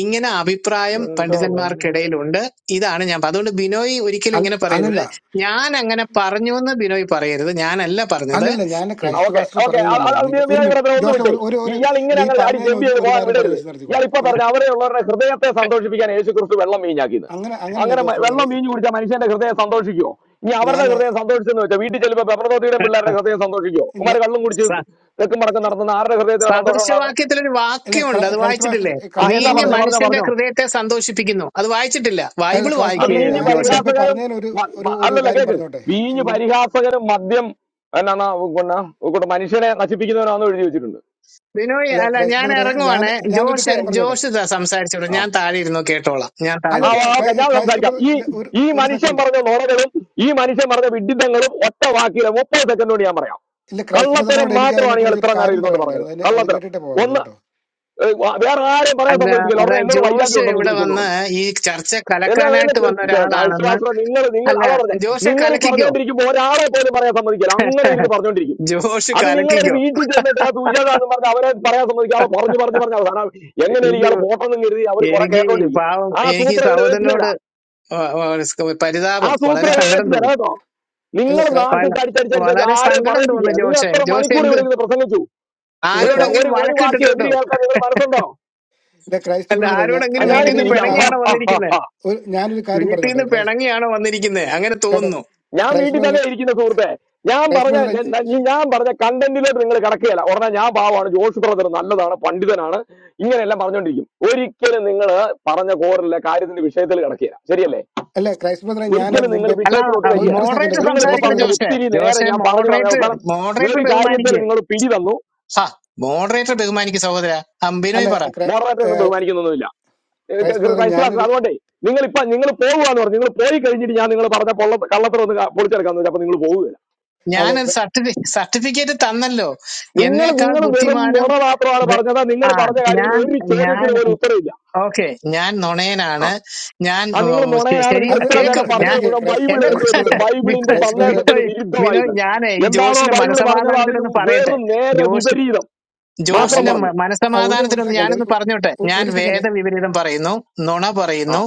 Speaker 6: ഇങ്ങനെ അഭിപ്രായം പണ്ഡിതന്മാർക്കിടയിലുണ്ട് ഇതാണ് ഞാൻ പ- അതുകൊണ്ട് ബിനോയ് ഒരിക്കലും
Speaker 1: അൽ-
Speaker 6: ഇങ്ങനെ
Speaker 1: അല്ലല്ല
Speaker 6: പറയരുത് ഞാൻ അങ്ങനെ പറഞ്ഞു എന്ന് ബിനോയ് പറയരുത് ഞാനല്ല പറഞ്ഞത്
Speaker 1: അല്ലല്ല ഞാൻ ക്രൈസ്റ്റ്
Speaker 4: ഓക്കെ
Speaker 1: പാസ്റ്റർ
Speaker 4: ഓക്കെ
Speaker 1: പറയുന്നല്ല പറഞ്ഞു നിക്ക് ഒരു മിനിറ്റ്
Speaker 4: ഒന്ന്
Speaker 1: ജോഷ
Speaker 4: വിട്ടേ
Speaker 1: ഒരു ഒരു ഒരു
Speaker 4: ഇയാൾ
Speaker 1: അല്ല
Speaker 4: ഇങ്ങനെ
Speaker 1: ഈ
Speaker 4: അങ്ങനെ ചാടി
Speaker 1: പറഞ്ഞതിന്
Speaker 4: ജമ്പ്
Speaker 1: ഒന്ന്
Speaker 4: ചെയ്ത്
Speaker 1: ഒരു
Speaker 4: പോകാൻ
Speaker 1: കാര്യം പറഞ്ഞു
Speaker 4: വിടരുത്
Speaker 1: വെച്ച്
Speaker 4: ഇയാൾ
Speaker 1: നിർത്തിക്കോളാം
Speaker 4: ഇപ്പൊ
Speaker 1: ഞാൻ
Speaker 4: പറഞ്ഞ അവിടെ ഉള്ളവരുടെ ഹൃദയത്തെ സന്തോഷിപ്പിക്കാൻ യേശു ക്രിസ്തു വെള്ളം വീഞ്ഞാക്കിന്ന്
Speaker 1: അങ്ങനെ അങ്ങനല്ല
Speaker 4: അങ്ങനെ മ-
Speaker 1: ജോഷ്
Speaker 4: വെള്ളം
Speaker 1: ബ്രദറെ
Speaker 4: വീഞ്ഞു കുടിച്ചാൽ മനുഷ്യന്റെ ഹൃദയം സന്തോഷിക്കുമോ ഇനി അവരുടെ ഹൃദയം
Speaker 1: ഞാൻ
Speaker 4: സന്തോഷിച്ചെന്ന് വെച്ചാൽ വീട്ടിൽ ചെല്ലുമ്പോൾ പെപ്രദോതിയുടെയും പിള്ളേരുടെ ഹൃദയം സന്തോഷിക്കുമോ ഉമാർ കള്ളും കുടിച്ച്
Speaker 6: സ-
Speaker 4: തെക്കും മടക്കം നടത്തുന്ന ആരുടെ ഹൃദയത്തിലാണ് സന്തോഷം ഉണ്ടാകുന്നത്
Speaker 6: സദൃശവാക്യത്തിലൊരു
Speaker 1: അല്ല
Speaker 6: വാക്യമുണ്ട്
Speaker 1: ക്രൈ-
Speaker 6: അത്
Speaker 1: ക്രൈസ്റ്റ് പാസ്റ്റർ
Speaker 6: വായിച്ചിട്ടില്ലേ
Speaker 4: ആ
Speaker 1: ക്രൈസ്റ്റ്
Speaker 4: എന്നാ
Speaker 6: വീഞ്ഞ്
Speaker 1: ബ്രദറെ
Speaker 4: പറഞ്ഞോ പറഞ്ഞോ
Speaker 6: മനുഷ്യന്റെ
Speaker 4: പറഞ്ഞോ
Speaker 6: ഹൃദയത്തെ സന്തോഷിപ്പിക്കുന്നു അത് വായിച്ചിട്ടില്ല
Speaker 1: അല്ല
Speaker 6: ബൈബിള്
Speaker 1: ക്രൈസ്റ്റ്
Speaker 4: ആ
Speaker 1: ബ്രദറെ
Speaker 4: വീഞ്ഞ്
Speaker 6: വായിക്കുക
Speaker 1: ഞാൻ
Speaker 6: ജോഷെ
Speaker 1: മുമ്പേ
Speaker 4: പരിഹാസകരും
Speaker 1: പറഞ്ഞതിന് ഒരു
Speaker 4: മ-
Speaker 1: ഒരു
Speaker 4: മ-
Speaker 1: ഒരു
Speaker 4: അല്ലല്ല
Speaker 1: കാര്യം
Speaker 4: കേക്ക്
Speaker 1: പറഞ്ഞോട്ടെ
Speaker 4: വീഞ്ഞ്
Speaker 1: മും-
Speaker 4: പരിഹാസകരും മദ്യം എന്നാ കൂട്ട മനുഷ്യനെ നശിപ്പിക്കുന്നവനാണെന്ന് എഴുതി വെച്ചിട്ടുണ്ട്
Speaker 6: ബിനോയ്
Speaker 1: അല്ല
Speaker 6: അല്ല
Speaker 1: ക്രൈസ്റ്റ്
Speaker 6: ഞാൻ
Speaker 1: ബ്രദറെ ഞാൻ
Speaker 6: ഇറങ്ങുവാണ്
Speaker 1: ഞാനൊരു
Speaker 6: ജോഷ്
Speaker 1: കാര്യം പറഞ്ഞോട്ടെ
Speaker 6: ജോഷ് ദാ സംസാരിച്ചോളൂ
Speaker 4: ആ
Speaker 6: ഞാൻ താഴെ ഇരുന്നു കേട്ടോളാം ഞാൻ താഴെ
Speaker 4: ആ
Speaker 6: ഇരുന്നു.
Speaker 1: അല്ലല്ല
Speaker 4: ഓക്കെ
Speaker 1: ക്രൈ-
Speaker 4: ഞാൻ
Speaker 1: ക്രൈസ്റ്റ്
Speaker 4: സംസാരിക്കാം
Speaker 1: ബ്രദർ
Speaker 4: ഈ
Speaker 1: ഇല്ല, ഒരു
Speaker 4: ഈ
Speaker 1: ഒരു
Speaker 4: മനുഷ്യൻ
Speaker 1: സെക്കൻഡ്
Speaker 4: പറഞ്ഞ നുണകളും ഈ മനുഷ്യൻ പറഞ്ഞ വിഡിതങ്ങളും ഒറ്റ വാക്കിലെ മുപ്പത് സെക്കൻഡ് കൊണ്ട് ഞാൻ പറയാം
Speaker 1: ഇല്ല ക്രൈസ്റ്റ്
Speaker 4: കള്ളത്തരം
Speaker 1: ബ്രദറിനോട് എനിക്ക്
Speaker 4: മാത്രമാണ് ഇയാൾ
Speaker 1: അതിനെക്കുറിച്ച് ഒരു
Speaker 4: ഇത്ര നേരം
Speaker 1: കാര്യം
Speaker 4: ഇരുന്നുകൊണ്ട് പറഞ്ഞത്
Speaker 1: പറയാനുണ്ടായിരുന്നു അതിന് അത്
Speaker 4: കള്ളത്തരം
Speaker 1: കേട്ടിട്ടേ പോവുള്ളൂ
Speaker 4: ഒന്ന്
Speaker 1: കേട്ടോ
Speaker 4: ഏഹ്, വ- വേറെ ആരെയും പറയാൻ
Speaker 6: അല്ല
Speaker 4: സമ്മതിക്കില്ല ഉടനെ
Speaker 6: അതായത്
Speaker 4: എന്നോട് വൈരാഗ്യം
Speaker 6: ജോഷ്
Speaker 4: ഉണ്ടെന്ന്
Speaker 6: ഇവിടെ
Speaker 4: ചോദിച്ചോണ്ട്
Speaker 6: വന്ന്
Speaker 4: തുടങ്ങും
Speaker 6: ഈ ചർച്ച
Speaker 4: എല്ലാം അതിനെ
Speaker 6: കലക്കാനായിട്ട് വന്ന ഒരാളാണെന്ന്
Speaker 4: കുറിച്ച് നിങ്ങൾ നിങ്ങൾ
Speaker 6: അല്ല
Speaker 4: അതാ പറഞ്ഞത്
Speaker 6: ജോഷെ
Speaker 4: നിങ്ങൾ ഈ
Speaker 6: കലക്കിക്കോ
Speaker 4: പറഞ്ഞുകൊണ്ടിരിക്കുമ്പോൾ ഒരാളെ പോലും പറയാൻ സമ്മതിക്കില്ല അങ്ങനെ ഇരുന്ന് പറഞ്ഞുകൊണ്ടിരിക്കും
Speaker 6: ജോഷ്
Speaker 4: അത് നിങ്ങളൊരു
Speaker 6: കലക്കിക്കോ
Speaker 4: വീട്ടിൽ ചെന്നിട്ട് ആ തുജാതാന്ന് പറഞ്ഞ് അവരെ പറയാൻ സമ്മതിക്കാതെ പറഞ്ഞു പറഞ്ഞു പറഞ്ഞു അവസാനം എങ്ങനെയാണ്
Speaker 6: എനിക്ക്
Speaker 4: ഇയാൾ പോട്ടെന്നും കരുതി അവർ കുറെ
Speaker 6: എനിക്ക് ഈ
Speaker 4: കേട്ടോണ്ടിരിക്കും
Speaker 6: പാവം
Speaker 4: ആ
Speaker 6: എനിക്ക് ഈ
Speaker 4: സൂത്രം ഇവിടെ ഏറ്റില്ല
Speaker 6: സഹോദരനോട് വ- വ-
Speaker 4: ആ
Speaker 6: പരിതാപം വളരെ
Speaker 1: ആ,
Speaker 4: സൂത്രങ്ങൾ
Speaker 6: സങ്കടം
Speaker 4: ഏറ്റില്ല
Speaker 6: തോന്നി
Speaker 4: കേട്ടോ
Speaker 1: ഇല്ല
Speaker 4: നിങ്ങൾ
Speaker 1: ക്രൈ
Speaker 4: നാക്കിട്ട്
Speaker 6: വല-
Speaker 4: അടിച്ചടിച്ചടിച്ചടിച്ച്
Speaker 6: വളരെ
Speaker 4: ആരെ
Speaker 6: സങ്കടം
Speaker 4: പറയിപ്പിക്കുക
Speaker 6: തോന്നുന്നു
Speaker 4: നിങ്ങൾ
Speaker 6: ജോഷെ
Speaker 4: എത്ര
Speaker 6: ജോഷ്
Speaker 4: മണിക്കൂർ
Speaker 6: എന്ത്
Speaker 4: ഇവിടെ ഇരുന്ന് പ്രസംഗിച്ചു
Speaker 1: ഇല്ല
Speaker 4: എന്നിട്ട്
Speaker 1: ക്രൈ
Speaker 6: ആരോടെങ്കിലും
Speaker 4: ഒരു ഒരു വാക്ക്
Speaker 6: വഴക്കിട്ടിട്ടുണ്ടോ
Speaker 4: എതിരി കേൾക്കാൻ നിങ്ങൾ മനസ്സുണ്ടോ
Speaker 1: ഇല്ല ക്രൈസ്റ്റ്
Speaker 6: അല്ല
Speaker 1: ബ്രദറെ ഞാൻ
Speaker 4: ആ
Speaker 6: ആരോടെങ്കിലും വീട്ടിൽ
Speaker 4: ഞാനും
Speaker 1: ഞാനൊരു
Speaker 6: നിന്ന്
Speaker 1: ഒരു
Speaker 4: ചിരിക്കാം ഹ,
Speaker 1: കാര്യം
Speaker 6: പിണങ്ങിയാണോ
Speaker 4: ഹ, ഹ,
Speaker 6: വന്നിരിക്കുന്നത്
Speaker 4: ഹ.
Speaker 1: ഒരു ഞാനൊരു കാര്യം
Speaker 6: വീട്ടിൽ
Speaker 1: പറഞ്ഞോട്ടെ
Speaker 6: നിന്ന്
Speaker 1: ക്രൈസ്റ്റ്
Speaker 6: പിണങ്ങിയാണ് വന്നിരിക്കുന്നത് അങ്ങനെ
Speaker 1: കേട്ടോ
Speaker 6: തോന്നുന്നു
Speaker 4: ഞാൻ
Speaker 1: ക്രൈസ്റ്റ്
Speaker 4: വീട്ടിൽ
Speaker 1: ബ്രദറെ
Speaker 4: തന്നെ ഇരിക്കുന്ന സുഹൃത്തെ ഞാൻ
Speaker 1: ക്രൈസ്റ്റ്
Speaker 4: പറഞ്ഞ
Speaker 1: ബ്രദറെ
Speaker 4: ന- ന- ഈ ഞാൻ പറഞ്ഞ കണ്ടന്റിലോട്ട് നിങ്ങൾ കിടക്കുകയല്ല ഉടനെ ഞാൻ പാവമാണ് ജോഷ് ബ്രദർ നല്ലതാണ് പണ്ഡിതനാണ് ഇങ്ങനെയെല്ലാം പറഞ്ഞുകൊണ്ടിരിക്കും ഒരിക്കലും നിങ്ങൾ പറഞ്ഞ കോറിലെ കാര്യത്തിന്റെ വിഷയത്തിൽ കിടക്കുകയില്ല ശരിയല്ലേ
Speaker 1: അല്ല ക്രൈസ്റ്റ് ബ്രദറെ ഞാൻ
Speaker 4: ഒരിക്കലും നിങ്ങൾ
Speaker 1: മുമ്പേ
Speaker 6: അല്ല
Speaker 4: വിഷയത്തിലോട്ട് വരികയില്ല
Speaker 1: ഒരു സെക്കൻഡ്
Speaker 6: മോഡറേറ്റർ
Speaker 4: നിങ്ങളിപ്പോ
Speaker 1: ക്രൈസ്റ്റ്
Speaker 6: സംസാരിക്കട്ടെ
Speaker 4: പറഞ്ഞ
Speaker 1: ബ്രദർ
Speaker 6: ജോഷെ
Speaker 4: ഒത്തിരി നേരം
Speaker 6: ജോഷെ
Speaker 4: ഞാൻ പറഞ്ഞു പറഞ്ഞ
Speaker 6: മോഡറേറ്റർ
Speaker 4: അവസാനം
Speaker 6: മോഡറേറ്റർ
Speaker 4: ഒരു കാര്യത്തിൽ
Speaker 6: ബഹുമാനിക്ക്
Speaker 4: നിങ്ങൾ പിടി തന്നു
Speaker 6: ഹാ മോഡറേറ്റർ ബഹുമാനിക്ക് സഹോദര അമ്പിനോയ് പറ
Speaker 4: മോഡറേറ്റർ
Speaker 1: അല്ല
Speaker 4: ഒന്നും ബഹുമാനിക്കുന്നൊന്നുമില്ല ഏഹ് ക-
Speaker 1: ക്രൈസ്റ്റ്
Speaker 4: ക-
Speaker 1: ബ്രദറെ
Speaker 4: ക്രൈസ്റ്റ് പാസ്റ്റർ
Speaker 1: ഞാനൊരു
Speaker 4: അതുകൊണ്ടേ നിങ്ങൾ ഇപ്പൊ നിങ്ങൾ പോകുകയെന്ന് പറഞ്ഞു നിങ്ങൾ പോയി കഴിഞ്ഞിട്ട് ഞാൻ നിങ്ങൾ പറഞ്ഞ പൊള്ള കള്ളത്തരം ഒന്ന് ക- പൊളിച്ചെടുക്കാന്ന് വെച്ചാൽ അപ്പൊ നിങ്ങൾ പോവുകയില്ല
Speaker 1: അല്ല
Speaker 6: ഞാൻ
Speaker 1: ക്ര-
Speaker 6: സർട്ടിഫി സർട്ടിഫിക്കറ്റ് തന്നല്ലോ
Speaker 4: നിങ്ങൾ
Speaker 6: എന്നേക്കാൾ
Speaker 4: നിങ്ങൾ വെറും
Speaker 6: ബുദ്ധിമാനും
Speaker 4: നുണ മാത്രമാണ്
Speaker 6: വെ-
Speaker 4: പറഞ്ഞത് നിങ്ങൾ
Speaker 6: ആ
Speaker 4: പറഞ്ഞ കാര്യത്തിൽ
Speaker 6: ഞാൻ
Speaker 4: ഒരു
Speaker 6: ഞാൻ
Speaker 4: ചോദ്യത്തിന് പോലും ഉത്തരവില്ല
Speaker 6: ഓക്കെ ഞാൻ
Speaker 4: ആ
Speaker 6: നുണയനാണ് ഞാൻ
Speaker 4: ആ നിങ്ങൾ
Speaker 6: ഉം, ശ-
Speaker 4: നുണയാണ്
Speaker 6: ശരി
Speaker 4: നിങ്ങൾ
Speaker 1: അത്
Speaker 4: ഇത്ര
Speaker 1: അത്
Speaker 6: കേക്ക്
Speaker 4: നേരം
Speaker 6: ഞാൻ
Speaker 4: പറഞ്ഞത്
Speaker 1: നിർത്തിക്കേ
Speaker 4: മുഴുവൻ
Speaker 1: ക്രൈസ്റ്റ്
Speaker 4: ബൈബിൾ
Speaker 6: എന്നെ
Speaker 4: എടുത്തു
Speaker 1: ക്രൈസ്റ്റ്
Speaker 6: കുറിച്ച്
Speaker 4: വെച്ചിട്ട്
Speaker 1: ബ്രദറെ
Speaker 4: ബൈബിളിന്റെ
Speaker 1: ക്രൈസ്റ്റ് ബ്രദറെ
Speaker 4: സന്ദേശത്തിന്
Speaker 6: ബിനോയ് ബിനോയ്
Speaker 4: വിരുദ്ധമായിട്ട്
Speaker 6: ഞാനേ ഈ
Speaker 4: എന്താണോ
Speaker 6: ജോഷിന്റെ
Speaker 4: ബൈബിൾ പറഞ്ഞത് അതിന്
Speaker 6: മനസമാധാനത്തിനൊന്ന് പറയട്ടെ
Speaker 4: വെറും നേരെ
Speaker 6: ജോഷ്
Speaker 4: വിപരീതം
Speaker 1: ആ,
Speaker 4: മാത്രം
Speaker 1: അല്ല
Speaker 6: ജോഷിന്റെ മ-
Speaker 4: പറഞ്ഞു
Speaker 1: ആ, ഒരു ഒരു
Speaker 6: മനസ്സമാധാനത്തിനൊന്ന്
Speaker 1: സെക്കൻഡ്
Speaker 6: ഞാനൊന്ന് പറഞ്ഞോട്ടെ ഞാൻ
Speaker 1: ഒരു സെക്കൻഡ്
Speaker 6: വേദവിപരീതം പറയുന്നു നുണ
Speaker 4: ആ
Speaker 6: പറയുന്നു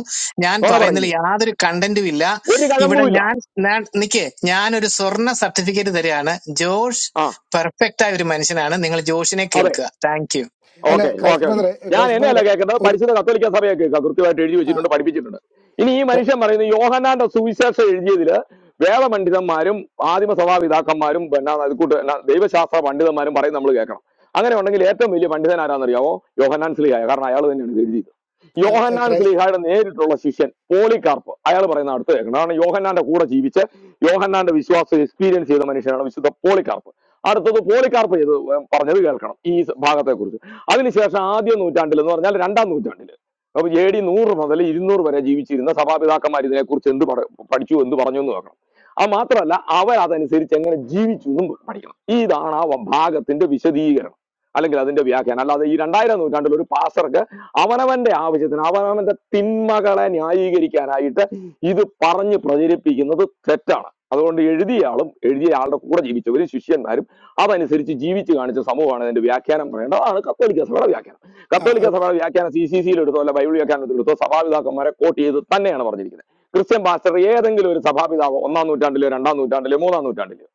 Speaker 6: ഞാൻ
Speaker 4: നുണ
Speaker 6: പറയുന്നതിൽ
Speaker 4: പറയുന്നു
Speaker 6: യാതൊരു കണ്ടന്റും ഇല്ല
Speaker 4: ഒരു
Speaker 6: ഇവിടെ
Speaker 4: കഴമ്പുമില്ല
Speaker 6: ഞാൻ ഞാൻ- നിക്കേ ഞാനൊരു സ്വർണ്ണ സർട്ടിഫിക്കറ്റ് തരികയാണ് ജോഷ്
Speaker 4: ആ
Speaker 6: പെർഫെക്റ്റ് ആയ ഒരു മനുഷ്യനാണ് നിങ്ങൾ ജോഷിനെ
Speaker 4: അതെ
Speaker 6: കേൾക്കുക താങ്ക് യു
Speaker 1: അല്ല
Speaker 4: ഓക്കെ
Speaker 1: ക്രൈസ്റ്റ്
Speaker 4: ഓക്കെ ഓക്കെ
Speaker 1: ബ്രദറെ
Speaker 4: ഞാൻ
Speaker 1: ക്രൈസ്റ്റ്
Speaker 4: എന്നെയല്ല
Speaker 1: ബ്രദറെ
Speaker 4: കേൾക്കുന്നത്
Speaker 1: ഒരു
Speaker 4: പരിശുദ്ധ കത്തോലിക്ക സഭയെ കേൾക്കുക കൃത്യമായിട്ട് എഴുതി
Speaker 1: ആ,
Speaker 4: വെച്ചിട്ടുണ്ട് പഠിപ്പിച്ചിട്ടുണ്ട് ഇനി ഈ
Speaker 1: ക്ര-
Speaker 4: മനുഷ്യൻ പറയുന്നത് യോഹനാന്റെ സുവിശേഷം എഴുതിയതില് വേദപണ്ഡിതന്മാരും ആദിമ സഭാപിതാക്കന്മാരും പിന്നെ അത് കൂട്ട് എന്നാ ദൈവശാസ്ത്ര പണ്ഡിതന്മാരും പറയും നമ്മൾ കേൾക്കണം അങ്ങനെ ഉണ്ടെങ്കിൽ ഏറ്റവും വലിയ പണ്ഡിതൻ ആരാന്നറിയാമോ യോഹന്നാൻ സ്ലീഹായ കാരണം അയാൾ തന്നെയാണ് ഇത് എഴുതിയത്
Speaker 1: ആ,
Speaker 4: യോഹന്നാൻ
Speaker 1: ക്രൈസ്റ്റ്
Speaker 4: സ്ലീഹായുടെ നേരിട്ടുള്ള ശിഷ്യൻ പോളികാർപ്പ് അയാൾ പറയുന്ന അടുത്ത് കേൾക്കണം കാരണം യോഹന്നാന്റെ കൂടെ ജീവിച്ച് യോഹന്നാന്റെ വിശ്വാസം എക്സ്പീരിയൻസ് ചെയ്ത മനുഷ്യനാണ് വിശുദ്ധ പോളികാർപ്പ് അടുത്തത് പോളികാർപ്പ് ചെയ്ത് പറഞ്ഞത് കേൾക്കണം ഈ ഭാഗത്തെക്കുറിച്ച് അതിനുശേഷം ആദ്യ നൂറ്റാണ്ടിൽ എന്ന് പറഞ്ഞാൽ രണ്ടാം നൂറ്റാണ്ടിൽ അപ്പൊ എ ഡി നൂറ് മുതൽ ഇരുന്നൂറ് വരെ ജീവിച്ചിരുന്ന സഭാപിതാക്കന്മാർ ഇതിനെക്കുറിച്ച് എന്ത് പഠ- പഠിച്ചു എന്ത് പറഞ്ഞു എന്ന് നോക്കണം അത് മാത്രമല്ല അവർ അതനുസരിച്ച് എങ്ങനെ ജീവിച്ചു എന്നും പഠിക്കണം ഇതാണ് ആ ഭാഗത്തിന്റെ വിശദീകരണം അല്ലെങ്കിൽ അതിന്റെ വ്യാഖ്യാനം അല്ലാതെ ഈ രണ്ടായിരം നൂറ്റാണ്ടിൽ ഒരു പാസർക്ക് അവനവന്റെ ആവശ്യത്തിന് അവനവന്റെ തിന്മകളെ ന്യായീകരിക്കാനായിട്ട് ഇത് പറഞ്ഞ് പ്രചരിപ്പിക്കുന്നത് തെറ്റാണ് അതുകൊണ്ട് എഴുതിയ ആളും എഴുതിയ ആളുടെ കൂടെ ജീവിച്ചവരും ശിഷ്യന്മാരും അതനുസരിച്ച് ജീവിച്ച് കാണിച്ച സമൂഹമാണ് അതിന്റെ വ്യാഖ്യാനം പറയേണ്ടത് അതാണ് കത്തോലിക്ക സഭയുടെ വ്യാഖ്യാനം
Speaker 1: ആ
Speaker 4: കത്തോലിക്ക
Speaker 1: ഓക്കെ
Speaker 4: സഭയുടെ വ്യാഖ്യാനം സി സി സിയിൽ എടുത്തോ അല്ല ബൈബിൾ വ്യാഖ്യാനത്തിൽ എടുത്തോ സഭാപിതാക്കന്മാരെ കോട്ട് ചെയ്ത് തന്നെയാണ് പറഞ്ഞിരിക്കുന്നത് ക്രിസ്ത്യൻ പാസ്റ്റർ ഏതെങ്കിലും ഒരു സഭാപിതാവ് ഒന്നാം നൂറ്റാണ്ടിലോ രണ്ടാം നൂറ്റാണ്ടിലോ മൂന്നാം നൂറ്റാണ്ടിലോ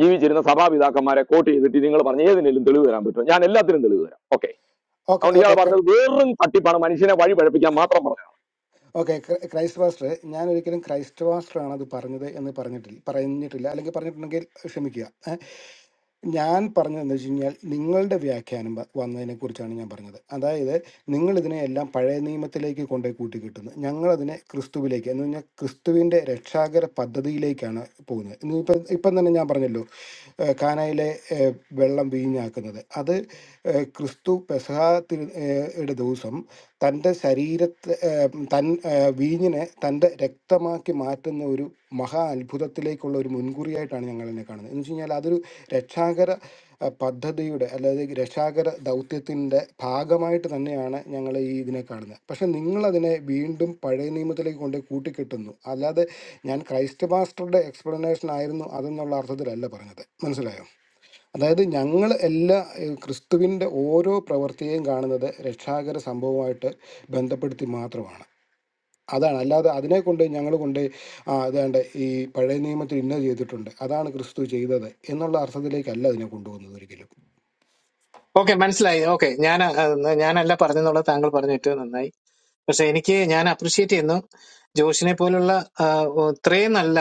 Speaker 4: ജീവിച്ചിരുന്ന സഭാപിതാക്കന്മാരെ കോട്ട് ചെയ്തിട്ട് നിങ്ങൾ പറഞ്ഞ ഏതിനെങ്കിലും തെളിവ് തരാൻ പറ്റുമോ ഞാൻ എല്ലാത്തിനും തെളിവ് തരാം ഓക്കെ അതുകൊണ്ട് ഇയാൾ
Speaker 1: ഓക്കെ
Speaker 4: പറഞ്ഞത് വെറും തട്ടിപ്പാണ് മനുഷ്യനെ വഴി പഴപ്പിക്കാൻ മാത്രം പറഞ്ഞു
Speaker 1: ഓക്കെ ക്രൈസ്റ്റ് പാസ്റ്ററെ ഞാൻ ഒരിക്കലും ക്രൈസ്റ്റ് പാസ്റ്റർ ആണ് അത് പറഞ്ഞത് എന്ന് പറഞ്ഞിട്ടില്ല പറഞ്ഞിട്ടില്ല അല്ലെങ്കിൽ പറഞ്ഞിട്ടുണ്ടെങ്കിൽ ക്ഷമിക്കുക ഞാൻ പറഞ്ഞതെന്ന് വെച്ച് കഴിഞ്ഞാൽ നിങ്ങളുടെ വ്യാഖ്യാനം വ- വന്നതിനെക്കുറിച്ചാണ് ഞാൻ പറഞ്ഞത് അതായത് നിങ്ങൾ ഇതിനെ എല്ലാം പഴയ നിയമത്തിലേക്ക് കൊണ്ടുപോയി കൂട്ടിക്കിട്ടുന്നു ഞങ്ങളതിനെ ക്രിസ്തുവിലേക്ക് എന്ന് പറഞ്ഞാൽ ക്രിസ്തുവിൻ്റെ രക്ഷാകര പദ്ധതിയിലേക്കാണ് പോകുന്നത് ഇന്നിപ്പം ഇപ്പം ഇപ്പം തന്നെ ഞാൻ പറഞ്ഞല്ലോ ഏഹ് കാനായിലെ ഏഹ് വെള്ളം വീഞ്ഞാക്കുന്നത് അത് ഏഹ് ക്രിസ്തു പെസഹ തിരു- ഏഹ് യുടെ ദിവസം തൻ്റെ ശരീരത്തെ ഏഹ് തൻ ഏഹ് വീഞ്ഞിനെ തൻ്റെ രക്തമാക്കി ആക്കി മാറ്റുന്ന ഒരു മഹാ അത്ഭുതത്തിലേക്കുള്ള ഒരു മുൻകുറിയായിട്ടാണ് ഞങ്ങൾ എന്നെ കാണുന്നത് എന്ന് വെച്ച് കഴിഞ്ഞാൽ അതൊരു രക്ഷാകര അഹ്, പദ്ധതിയുടെ അല്ലെങ്കിൽ രക്ഷാകര ദൗത്യത്തിൻ്റെ ഭാഗമായിട്ട് തന്നെയാണ് ഞങ്ങൾ ഈ ഇതിനെ കാണുന്നത് പക്ഷേ നിങ്ങളതിനെ വീണ്ടും പഴയ നിയമത്തിലേക്ക് കൊണ്ട് കൂട്ടിക്കെട്ടുന്നു അല്ലാതെ ഞാൻ ക്രൈസ്റ്റ് മാസ്റ്ററുടെ എക്സ്പ്ലനേഷൻ ആയിരുന്നു അതെന്നുള്ള അർത്ഥത്തിലല്ല പറഞ്ഞത് മനസ്സിലായോ അതായത് ഞങ്ങൾ എല്ലാ ഏഹ്, ക്രിസ്തുവിൻ്റെ ഓരോ പ്രവൃത്തിയെയും കാണുന്നത് രക്ഷാകര സംഭവമായിട്ട് ബന്ധപ്പെടുത്തി മാത്രമാണ് അതാണ് അല്ലാതെ അതിനെ കൊണ്ട് ഞങ്ങൾ കൊണ്ട് ആ അതാണ്ട് ഈ പഴയ നിയമത്തിൽ ഇന്ന ചെയ്തിട്ടുണ്ട് അതാണ് ക്രിസ്തു ചെയ്തത് എന്നുള്ള അർത്ഥത്തിലേക്കല്ല അതിനെ കൊണ്ടുപോകുന്നത് ഒരിക്കലും
Speaker 6: ഓക്കെ മനസ്സിലായി ഓക്കെ ഞാൻ ആ, ഞാനല്ല പറഞ്ഞെന്നുള്ളത് താങ്കൾ പറഞ്ഞിട്ട് നന്നായി പക്ഷെ എനിക്ക് ഞാൻ അപ്രിഷ്യേറ്റ് ചെയ്യുന്നു ജോഷിനെ പോലുള്ള ആ, ഇത്രയും നല്ല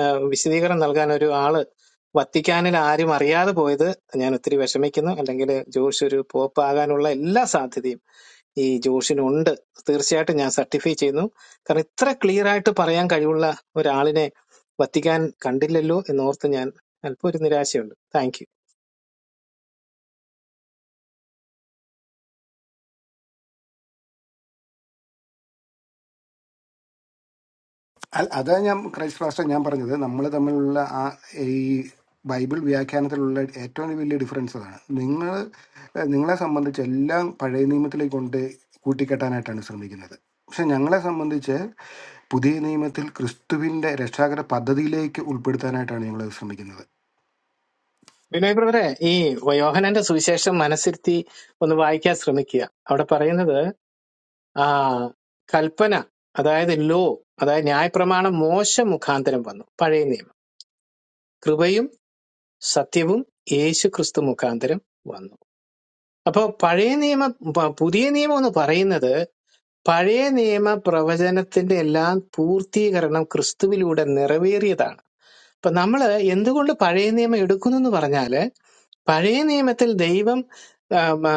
Speaker 6: ആ, വിശദീകരണം നൽകാൻ ഒരു ആള് വത്തിക്കാനിൽ ആരും അറിയാതെ പോയത് ഞാൻ ഒത്തിരി വിഷമിക്കുന്നു അല്ലെങ്കിൽ ജോഷ് ഒരു പോപ്പ് ആകാനുള്ള എല്ലാ സാധ്യതയും ഈ ജോഷിനുണ്ട് തീർച്ചയായിട്ടും ഞാൻ സർട്ടിഫൈ ചെയ്യുന്നു കാരണം ഇത്ര ക്ലിയർ ആയിട്ട് പറയാൻ കഴിവുള്ള ഒരാളിനെ വത്തിക്കാൻ കണ്ടില്ലല്ലോ എന്നോർത്ത് ഞാൻ അല്പം ഒരു നിരാശയുണ്ട് താങ്ക് യു
Speaker 1: അല്ല അതാ ഞാൻ ക്രൈസ്റ്റ് ഫാസ്റ്റർ ഞാൻ പറഞ്ഞത് നമ്മൾ തമ്മിലുള്ള ആ ഈ ബൈബിൾ വ്യാഖ്യാനത്തിലുള്ള ഏറ്റവും വലിയ ഡിഫറൻസ് അതാണ് നിങ്ങൾ നിങ്ങളെ സംബന്ധിച്ച് എല്ലാം പഴയ നിയമത്തിലേക്ക് കൊണ്ട് കൂട്ടിക്കെട്ടാനായിട്ടാണ് ശ്രമിക്കുന്നത് പക്ഷെ ഞങ്ങളെ സംബന്ധിച്ച് പുതിയ നിയമത്തിൽ ക്രിസ്തുവിൻ്റെ രക്ഷാകര പദ്ധതിയിലേക്ക് ഉൾപ്പെടുത്താനായിട്ടാണ് ഞങ്ങൾ ശ്രമിക്കുന്നത്
Speaker 6: വിനോയ് ബ്രദറെ ഈ യോഹനന്റെ സുവിശേഷം മനസ്സിരുത്തി ഒന്ന് വായിക്കാൻ ശ്രമിക്കുക അവിടെ പറയുന്നത് ആ കൽപ്പന അതായത് ലോ അതായത് ന്യായപ്രമാണം മോശ മുഖാന്തരം വന്നു പഴയ നിയമം കൃപയും സത്യവും യേശു ക്രിസ്തു മുഖാന്തരം വന്നു അപ്പൊ പഴയ നിയമ പ- പുതിയ നിയമം എന്ന് പറയുന്നത് പഴയ നിയമ പ്രവചനത്തിന്റെ എല്ലാം പൂർത്തീകരണം ക്രിസ്തുവിലൂടെ നിറവേറിയതാണ് അപ്പൊ നമ്മള് എന്തുകൊണ്ട് പഴയ നിയമം എടുക്കുന്നു എന്ന് പറഞ്ഞാല് പഴയ നിയമത്തിൽ ദൈവം ആം, ആ,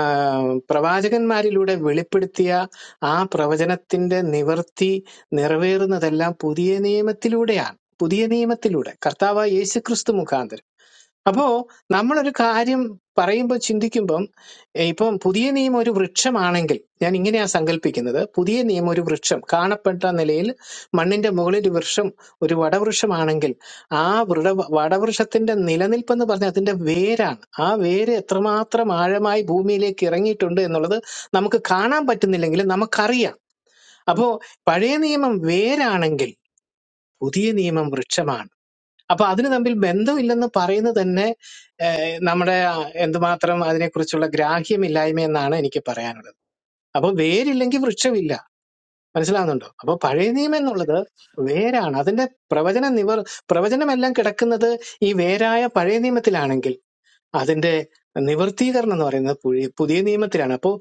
Speaker 6: പ്രവാചകന്മാരിലൂടെ വെളിപ്പെടുത്തിയ ആ പ്രവചനത്തിന്റെ നിവർത്തി നിറവേറുന്നതെല്ലാം പുതിയ നിയമത്തിലൂടെയാണ് പുതിയ നിയമത്തിലൂടെ കർത്താവ് യേശു ക്രിസ്തു മുഖാന്തരം അപ്പോ നമ്മളൊരു കാര്യം പറയുമ്പോൾ ചിന്തിക്കുമ്പം ഏ, ഇപ്പം പുതിയ നിയമം ഒരു വൃക്ഷമാണെങ്കിൽ ഞാൻ ഇങ്ങനെയാ സങ്കല്പിക്കുന്നത് പുതിയ നിയമം ഒരു വൃക്ഷം കാണപ്പെട്ട നിലയിൽ മണ്ണിന്റെ മുകളിൽ വൃക്ഷം ഒരു വടവൃക്ഷമാണെങ്കിൽ ആ വൃട വടവൃക്ഷത്തിന്റെ നിലനിൽപ്പ് എന്ന് പറഞ്ഞാൽ അതിന്റെ വേരാണ് ആ വേര് എത്രമാത്രം ആഴമായി ഭൂമിയിലേക്ക് ഇറങ്ങിയിട്ടുണ്ട് എന്നുള്ളത് നമുക്ക് കാണാൻ പറ്റുന്നില്ലെങ്കിലും നമുക്കറിയാം അപ്പോ പഴയ നിയമം വേരാണെങ്കിൽ പുതിയ നിയമം വൃക്ഷമാണ് അപ്പൊ അതിന് തമ്മിൽ ബന്ധമില്ലെന്ന് പറയുന്നത് തന്നെ നമ്മുടെ എന്തുമാത്രം അതിനെക്കുറിച്ചുള്ള ഗ്രാഹ്യമില്ലായ്മ എന്നാണ് എനിക്ക് പറയാനുള്ളത് അപ്പൊ വേരില്ലെങ്കിൽ വൃക്ഷമില്ല മനസ്സിലാവുന്നുണ്ടോ അപ്പൊ പഴയ നിയമം എന്നുള്ളത് വേരാണ് അതിന്റെ പ്രവചന നിവർ പ്രവചനമെല്ലാം കിടക്കുന്നത് ഈ വേരായ പഴയ നിയമത്തിലാണെങ്കിൽ അതിന്റെ നിവർത്തീകരണം എന്ന് പറയുന്നത് പുഴി- പുതിയ നിയമത്തിലാണ് അപ്പോൾ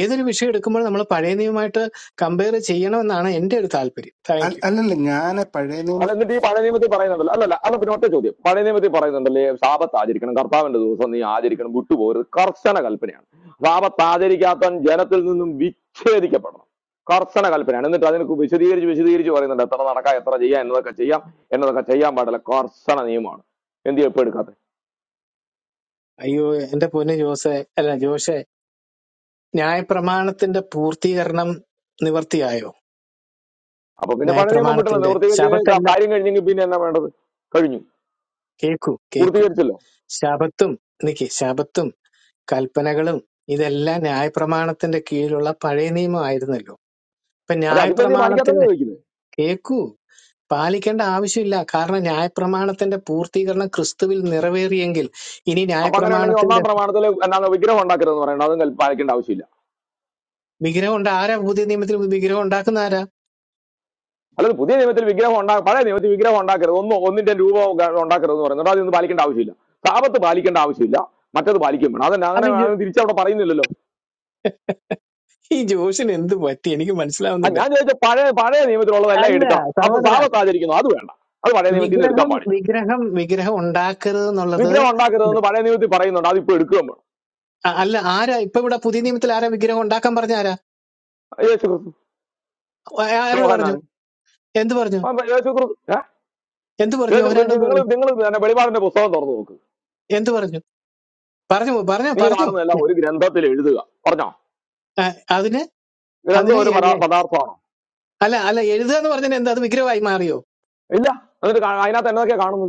Speaker 6: ഏതൊരു വിഷയം എടുക്കുമ്പോൾ നമ്മൾ പഴയ നിയമമായിട്ട് കമ്പയർ ചെയ്യണമെന്നാണ് എന്റെ ഒരു താല്പര്യം താങ്ക്
Speaker 1: അൽ-
Speaker 6: യു
Speaker 1: അല്ലല്ല ഞാൻ പഴയ നിയമ
Speaker 4: അല്ല എന്നിട്ട് ഈ പഴയ നിയമത്തിൽ പറയുന്നുണ്ടല്ലോ അല്ലല്ല അല്ല പിന്നെ ഒറ്റ ചോദ്യം പഴയ നിയമത്തിൽ പറയുന്നുണ്ടല്ലേ സാപത്ത് ആചരിക്കണം കർത്താവിന്റെ ദിവസം നീ ആചരിക്കണം വിട്ടുപോകരുത് കർശന കൽപ്പനയാണ് സാപത്ത് ആചരിക്കാത്തവൻ ജനത്തിൽ നിന്നും വിച്ഛേദിക്കപ്പെടണം കർശന കൽപ്പനയാണ് എന്നിട്ട് അതിനെ വിശദീകരിച്ച് വിശദീകരിച്ച് പറയുന്നുണ്ട് എത്ര നടക്കാം എത്ര ചെയ്യാം എന്നതൊക്കെ ചെയ്യാം എന്നതൊക്കെ ചെയ്യാൻ പാടില്ല കർശന നിയമമാണ് എന്ത് ചെയ്യും ഇപ്പൊ എടുക്കാത്ത
Speaker 6: അയ്യോ എന്റെ പൊന്ന് ജോസെ അല്ല ജോഷെ ന്യായപ്രമാണത്തിന്റെ പൂർത്തീകരണം നിവർത്തിയായോ
Speaker 4: അപ്പൊ പിന്നെ പഴയ നിയമം വിട്ടില്ല
Speaker 6: ന്യായപ്രമാണത്തിന്റെ
Speaker 4: നിവൃത്തീകരിച്ച് കഴിഞ്ഞ്
Speaker 6: ശബത്തല്ല
Speaker 4: കാര്യം കഴിഞ്ഞെങ്കിൽ പിന്നെ എന്നാ വേണ്ടത് കഴിഞ്ഞു
Speaker 6: കേക്കൂ കേക്കൂ
Speaker 4: പൂർത്തീകരിച്ചല്ലോ
Speaker 6: ശബത്തും എനിക്ക് ശബത്തും കൽപ്പനകളും ഇതെല്ലാം ന്യായപ്രമാണത്തിന്റെ കീഴിലുള്ള പഴയ നിയമമായിരുന്നല്ലോ ഇപ്പൊ
Speaker 4: അത് അതിപ്പോ എന്ത് പാലിക്കാത്തതെന്ന്
Speaker 6: ന്യായപ്രമാണത്തിന്റെ
Speaker 4: ചോദിക്കുന്നത്
Speaker 6: കേക്കൂ പാലിക്കേണ്ട ആവശ്യമില്ല കാരണം ന്യായപ്രമാണത്തിന്റെ പൂർത്തീകരണം ക്രിസ്തുവിൽ നിറവേറിയെങ്കിൽ ഇനി
Speaker 4: അപ്പൊ അങ്ങനെ ഉണ്ടെങ്കിൽ ഒന്നാം
Speaker 6: ന്യായപ്രമാണത്തിന്റെ
Speaker 4: പ്രമാണത്തിൽ എന്താണ് വിഗ്രഹം ഉണ്ടാക്കരുതെന്ന് പറയണം അതും കൽ- പാലിക്കേണ്ട ആവശ്യമില്ല
Speaker 6: വിഗ്രഹം ഉണ്ട് ആരാ പുതിയ നിയമത്തിൽ വിഗ്രഹം ഉണ്ടാക്കുന്ന ആരാ
Speaker 4: അല്ലാതെ പുതിയ നിയമത്തിൽ വിഗ്രഹം ഉണ്ടാ പഴയ നിയമത്തിൽ വിഗ്രഹം ഉണ്ടാക്കരുത് ഒന്നും ഒന്നിന്റെ രൂപം ഗ- ഉണ്ടാക്കരുത് എന്ന് പറയുന്നത് അതൊന്നും പാലിക്കേണ്ട ആവശ്യമില്ല സാപത്ത് പാലിക്കേണ്ട ആവശ്യമില്ല മറ്റത് പാലിക്കും വേണം അതന്നെ അങ്ങനെ
Speaker 6: അല്ല ജോ-
Speaker 4: അങ്ങനെ തിരിച്ചവിടെ പറയുന്നില്ലല്ലോ
Speaker 6: ഈ ജോഷിന് എന്ത് പറ്റി എനിക്ക്
Speaker 4: ആ
Speaker 6: മനസ്സിലാവുന്നില്ല
Speaker 4: ഞാൻ ചോദിച്ച പഴയ പഴയ നിയമത്തിലുള്ളതെല്ലാം
Speaker 6: അല്ല
Speaker 4: എടുക്കണം അപ്പൊ
Speaker 6: സഹോദര
Speaker 4: സാപത്ത് ആചരിക്കുന്നു അത് വേണ്ട അത് പഴയ നിയമത്തിൽ നിന്ന് എടുക്കാൻ
Speaker 6: വിഗ്രഹം
Speaker 4: പാടില്ല
Speaker 6: വിഗ്രഹം വിഗ്രഹം ഉണ്ടാക്കരുത് എന്നുള്ളത്
Speaker 4: വിഗ്രഹം ഉണ്ടാക്കരുതെന്ന് പഴയ നിയമത്തിൽ പറയുന്നുണ്ട് അതിപ്പോ എടുക്കുകയും വേണം
Speaker 6: ആ, അല്ല ആരാ ഇപ്പൊ ഇവിടെ പുതിയ നിയമത്തിൽ ആരാ വിഗ്രഹം ഉണ്ടാക്കാൻ പറഞ്ഞ ആരാ
Speaker 4: യേശു ക്രിസ്തു
Speaker 6: ആ- ആരോട് പറഞ്ഞു
Speaker 4: യോഹന്നാണ്
Speaker 6: എന്ത് പറഞ്ഞു
Speaker 4: അപ്പൊ യേശു ക്രിസ്തു ഏ?
Speaker 6: എന്ത് പറഞ്ഞു
Speaker 4: യേശു
Speaker 6: ഓരോടെന്ന്
Speaker 4: നിങ്ങൾ
Speaker 6: പറഞ്ഞു
Speaker 4: നിങ്ങൾ തന്നെ വെളിപാടിന്റെ പുസ്തകം തുറന്നു നോക്ക്
Speaker 6: എന്ത് പറഞ്ഞു പറഞ്ഞു പറഞ്ഞു
Speaker 4: നീ
Speaker 6: പറഞ്ഞു
Speaker 4: കാണുന്നതെല്ലാം ഒരു ഗ്രന്ഥത്തിൽ എഴുതുക പറഞ്ഞോ
Speaker 6: ആ, അതിന്
Speaker 4: ഗ്രന്ഥം
Speaker 6: അതിന്
Speaker 4: ഒരു പരാ-
Speaker 6: എന്നെ-
Speaker 4: പദാർത്ഥമാണോ
Speaker 6: അല്ല അല്ല എഴുതുക എന്ന് പറഞ്ഞാൽ എന്താ അത് വിഗ്രഹമായി മാറിയോ
Speaker 4: ഇല്ല എന്നിട്ട് കാ- അതിനകത്ത് എന്നതൊക്കെയാ കാണുന്നത്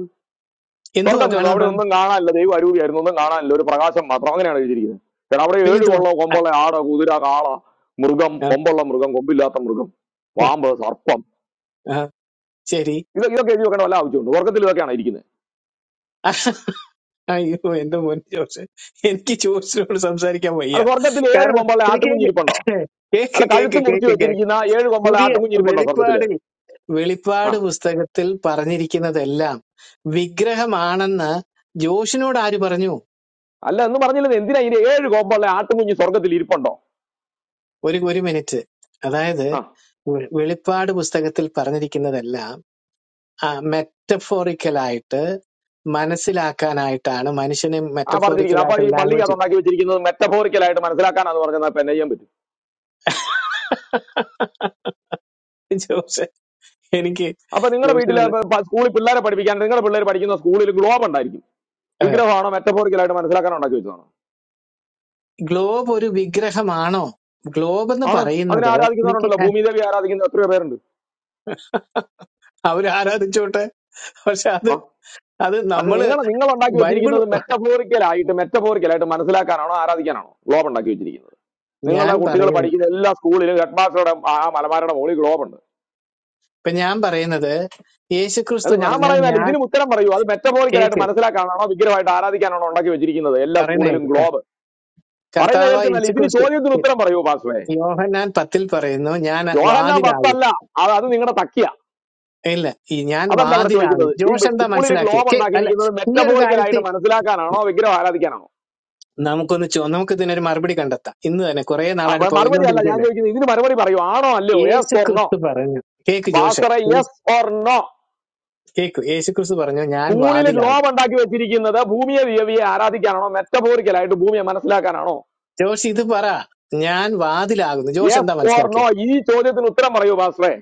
Speaker 6: എന്തുവാ
Speaker 4: സ്വർഗം ചെന്നു
Speaker 6: കാണുന്ന
Speaker 4: അവിടെ ഒന്നും കാണാനില്ല ദൈവം അരൂപിയായിരുന്നു ഒന്നും കാണാനില്ല ഒരു പ്രകാശം മാത്രം അങ്ങനെയാണ് എഴുതിയിരിക്കുന്നത് കാരണം അവിടെ
Speaker 6: പിന്നെ
Speaker 4: ഏഴ്
Speaker 6: എന്തുവാ
Speaker 4: കൊള്ളോ
Speaker 6: ആ,
Speaker 4: കൊമ്പുള്ള ആട കുതിര കാള മൃഗം
Speaker 6: ആ,
Speaker 4: കൊമ്പുള്ള മൃഗം കൊമ്പില്ലാത്ത മൃഗം പാമ്പ് സർപ്പം
Speaker 6: ആ, ശരി
Speaker 4: ഇത് ഇതൊക്കെ എഴുതി വെക്കേണ്ട വല്ല ആവശ്യമുണ്ട് സ്വർഗത്തിൽ ഇതൊക്കെയാണ് ഇരിക്കുന്നത്
Speaker 6: അയ്യോ എന്റെ മോൻ ജോസ് എനിക്ക് ജോസിനോട് സംസാരിക്കാൻ വയ്യ
Speaker 4: അല്ല സ്വർഗത്തിൽ ഏഴ്
Speaker 6: കാരണം
Speaker 4: കൊമ്പുള്ള
Speaker 6: ഇത് കേക്ക്
Speaker 4: ആട്ടുംകുഞ്ഞിരിപ്പുണ്ടോ
Speaker 6: കേക്ക്
Speaker 4: അല്ല
Speaker 6: കേക്ക്
Speaker 4: കഴുത്ത് മുറിച്ച്
Speaker 6: കേക്ക് കേക്ക്
Speaker 4: വെച്ചിരിക്കുന്ന ഏഴ് കൊമ്പുള്ള
Speaker 6: പുതിയ
Speaker 4: ആട്ടുംകുഞ്ഞിരിപ്പുണ്ടോ സ്വർഗത്തിൽ
Speaker 6: വെളിപ്പാടിൽ
Speaker 4: ആ
Speaker 6: വെളിപ്പാട് പുസ്തകത്തിൽ പറഞ്ഞിരിക്കുന്നതെല്ലാം വിഗ്രഹമാണെന്ന് ജോഷിനോട് ആര് പറഞ്ഞു
Speaker 4: അല്ല എന്ന് പറഞ്ഞില്ലേ എന്തിനാ ഇതിന് ഏഴ് കൊമ്പുള്ള ആട്ടുംകുഞ്ഞി സ്വർഗത്തിൽ ഇരിപ്പുണ്ടോ
Speaker 6: ഒരു ഒരു മിനിറ്റ് അതായത്
Speaker 4: ആ
Speaker 6: വെ- വെളിപ്പാട് പുസ്തകത്തിൽ പറഞ്ഞിരിക്കുന്നതെല്ലാം ആ മെറ്റഫോറിക്കലായിട്ട് മനസ്സിലാക്കാനായിട്ടാണ് മനുഷ്യന്
Speaker 4: ആ പറഞ്ഞിരിക്കുന്നത് അപ്പൊ
Speaker 6: മെറ്റഫോറിക്കലായിട്ട്
Speaker 4: ഈ പള്ളിക്കകത്ത്
Speaker 6: ലാംഗ്വേജ്
Speaker 4: ഉണ്ടാക്കി വെച്ചിരിക്കുന്നത് metaphorical ആയിട്ട് മനസ്സിലാക്കാനാന്ന് പറഞ്ഞാൽ ഇപ്പൊ എന്നെ ചെയ്യാൻ പറ്റും
Speaker 6: ജോസ് എനിക്ക്
Speaker 4: അപ്പൊ നിങ്ങളുടെ വീട്ടിലെ
Speaker 6: ജോസിനോട്
Speaker 4: സ്കൂളിൽ പിള്ളേരെ പഠിപ്പിക്കാൻ നിങ്ങളുടെ പിള്ളേർ പഠിക്കുന്ന സ്കൂളിൽ ഗ്ലോബ് ഉണ്ടായിരിക്കും
Speaker 6: ആ,
Speaker 4: വിഗ്രഹമാണോ metaphorical ആയിട്ട് മനസ്സിലാക്കാൻ ഉണ്ടാക്കി വെച്ചതാണോ
Speaker 6: ഗ്ലോബ് ഒരു വിഗ്രഹമാണോ ഗ്ലോബ് എന്ന്
Speaker 4: ആണ് അതിനെ
Speaker 6: പറയുന്നത് എനിക്ക്
Speaker 4: ആരാധിക്കുന്നവരുണ്ടല്ലോ ഭൂമിദേവി ആരാധിക്കുന്ന എത്രയോ പേരുണ്ട്
Speaker 6: അവർ ആരാധിച്ചോട്ടെ പക്ഷെ അത്
Speaker 4: ആ?
Speaker 6: അത്
Speaker 4: അത്
Speaker 6: നമ്മള്
Speaker 4: നിങ്ങൾ നിങ്ങൾ ഉണ്ടാക്കി
Speaker 6: ബൈബിൾ
Speaker 4: വെച്ചിരിക്കുന്നത് മെറ്റഫോറിക്കൽ ആയിട്ട് metaphorical ആയിട്ട് മനസ്സിലാക്കാനാണോ ആരാധിക്കാനാണോ ഗ്ലോബ് ഉണ്ടാക്കി വെച്ചിരിക്കുന്നത്
Speaker 6: ഞാൻ
Speaker 4: നിങ്ങളുടെ കുട്ടികൾ
Speaker 6: പറയുന്നത്
Speaker 4: പഠിക്കുന്ന എല്ലാ സ്കൂളിലും ഹെഡ് മാസ്റ്ററുടെ ആ മലമാരുടെ മുകളിൽ ഗ്ലോബ് ഉണ്ട്
Speaker 6: ഇപ്പൊ ഞാൻ പറയുന്നത് യേശുക്രിസ്തു
Speaker 4: അല്ല ഞാൻ
Speaker 6: പറഞ്ഞു
Speaker 4: പറയുന്നതല്ല
Speaker 6: ഞാൻ
Speaker 4: ഇതിനും ഉത്തരം പറയൂ അത് metaphorical ആയിട്ട്
Speaker 6: കേക്ക്
Speaker 4: മനസ്സിലാക്കാനാണോ വിഗ്രഹമായിട്ട് ആരാധിക്കാനാണോ ഉണ്ടാക്കി വെച്ചിരിക്കുന്നത് എല്ലാ
Speaker 6: പറയുന്ന
Speaker 4: സ്കൂളിലും
Speaker 6: കേൾക്ക
Speaker 4: ഗ്ലോബ് പറയുന്ന
Speaker 6: കർത്താവ്
Speaker 4: കേൾക്കുന്നല്ല ഇതിന്
Speaker 6: യേശുക്രിസ്തു
Speaker 4: ചോദ്യത്തിന് ഉത്തരം പറയൂ പാസ്വേ
Speaker 6: യോഹന്നാൻ പത്തിൽ പറയുന്നു ഞാൻ
Speaker 4: യോഹന്ന
Speaker 6: വാതിലാകും
Speaker 4: പത്തല്ല അത് അത് നിങ്ങളുടെ തക്കിയ
Speaker 6: ഇല്ല ഈ ഞാൻ
Speaker 4: അതല്ല ഇവിടെ
Speaker 6: വാതിലാകും
Speaker 4: ചോദിക്കുന്നത് ഈ
Speaker 6: ജോഷ് എന്താ
Speaker 4: സ്കൂളിൽ
Speaker 6: മനസ്സിലാക്കിയത്
Speaker 4: ഗ്ലോബ്
Speaker 6: കേ അല്ല
Speaker 4: ഉണ്ടാക്കിയിരിക്കുന്നത്
Speaker 6: ഈ ഒരു
Speaker 4: metaphorical
Speaker 6: കാര്യത്തെ
Speaker 4: ആയിട്ട് മനസ്സിലാക്കാനാണോ വിഗ്രഹം ആരാധിക്കാനാണോ
Speaker 6: നമുക്കൊന്ന് ചോ- നമുക്ക് ഇതിനൊരു മറുപടി കണ്ടെത്താം ഇന്ന് തന്നെ കുറെ
Speaker 4: ആ,
Speaker 6: നാളായിട്ട്
Speaker 4: മ- മറുപടി അല്ല ഞാൻ
Speaker 6: പുകഞ്ഞുകൊണ്ടിരിക്കുകയല്ലേ
Speaker 4: ചോദിക്കുന്നത് ഇതിന് മറുപടി പറയൂ ആണോ അല്ലയോ
Speaker 6: യേശു
Speaker 4: യെസ് ഓർ നോ
Speaker 6: ക്രിസ്തു പറഞ്ഞു കേക്ക് ജോഷെ
Speaker 4: ബാസറ
Speaker 6: യേശു-
Speaker 4: യെസ് ഓർ നോ
Speaker 6: കേക്ക് യേശു ക്രിസ്തു പറഞ്ഞു ഞാൻ
Speaker 4: സ്കൂളിൽ
Speaker 6: വാതിലാകും
Speaker 4: ഗ്ലോബ് ഉണ്ടാക്കി വെച്ചിരിക്കുന്നത് ഭൂമിയെ ദേവിയെ ആരാധിക്കാനാണോ metaphorical ആയിട്ട് ഭൂമിയെ മനസ്സിലാക്കാനാണോ
Speaker 6: ജോഷ് ഇത് പറ ഞാൻ വാതിലാകുന്നു ജോഷ്
Speaker 4: യെസ്
Speaker 6: എന്താ
Speaker 4: ഓർ നോ
Speaker 6: മനസ്സിലാക്കിയത്
Speaker 4: ഈ ചോദ്യത്തിന് ഉത്തരം പറയൂ ബാസറേ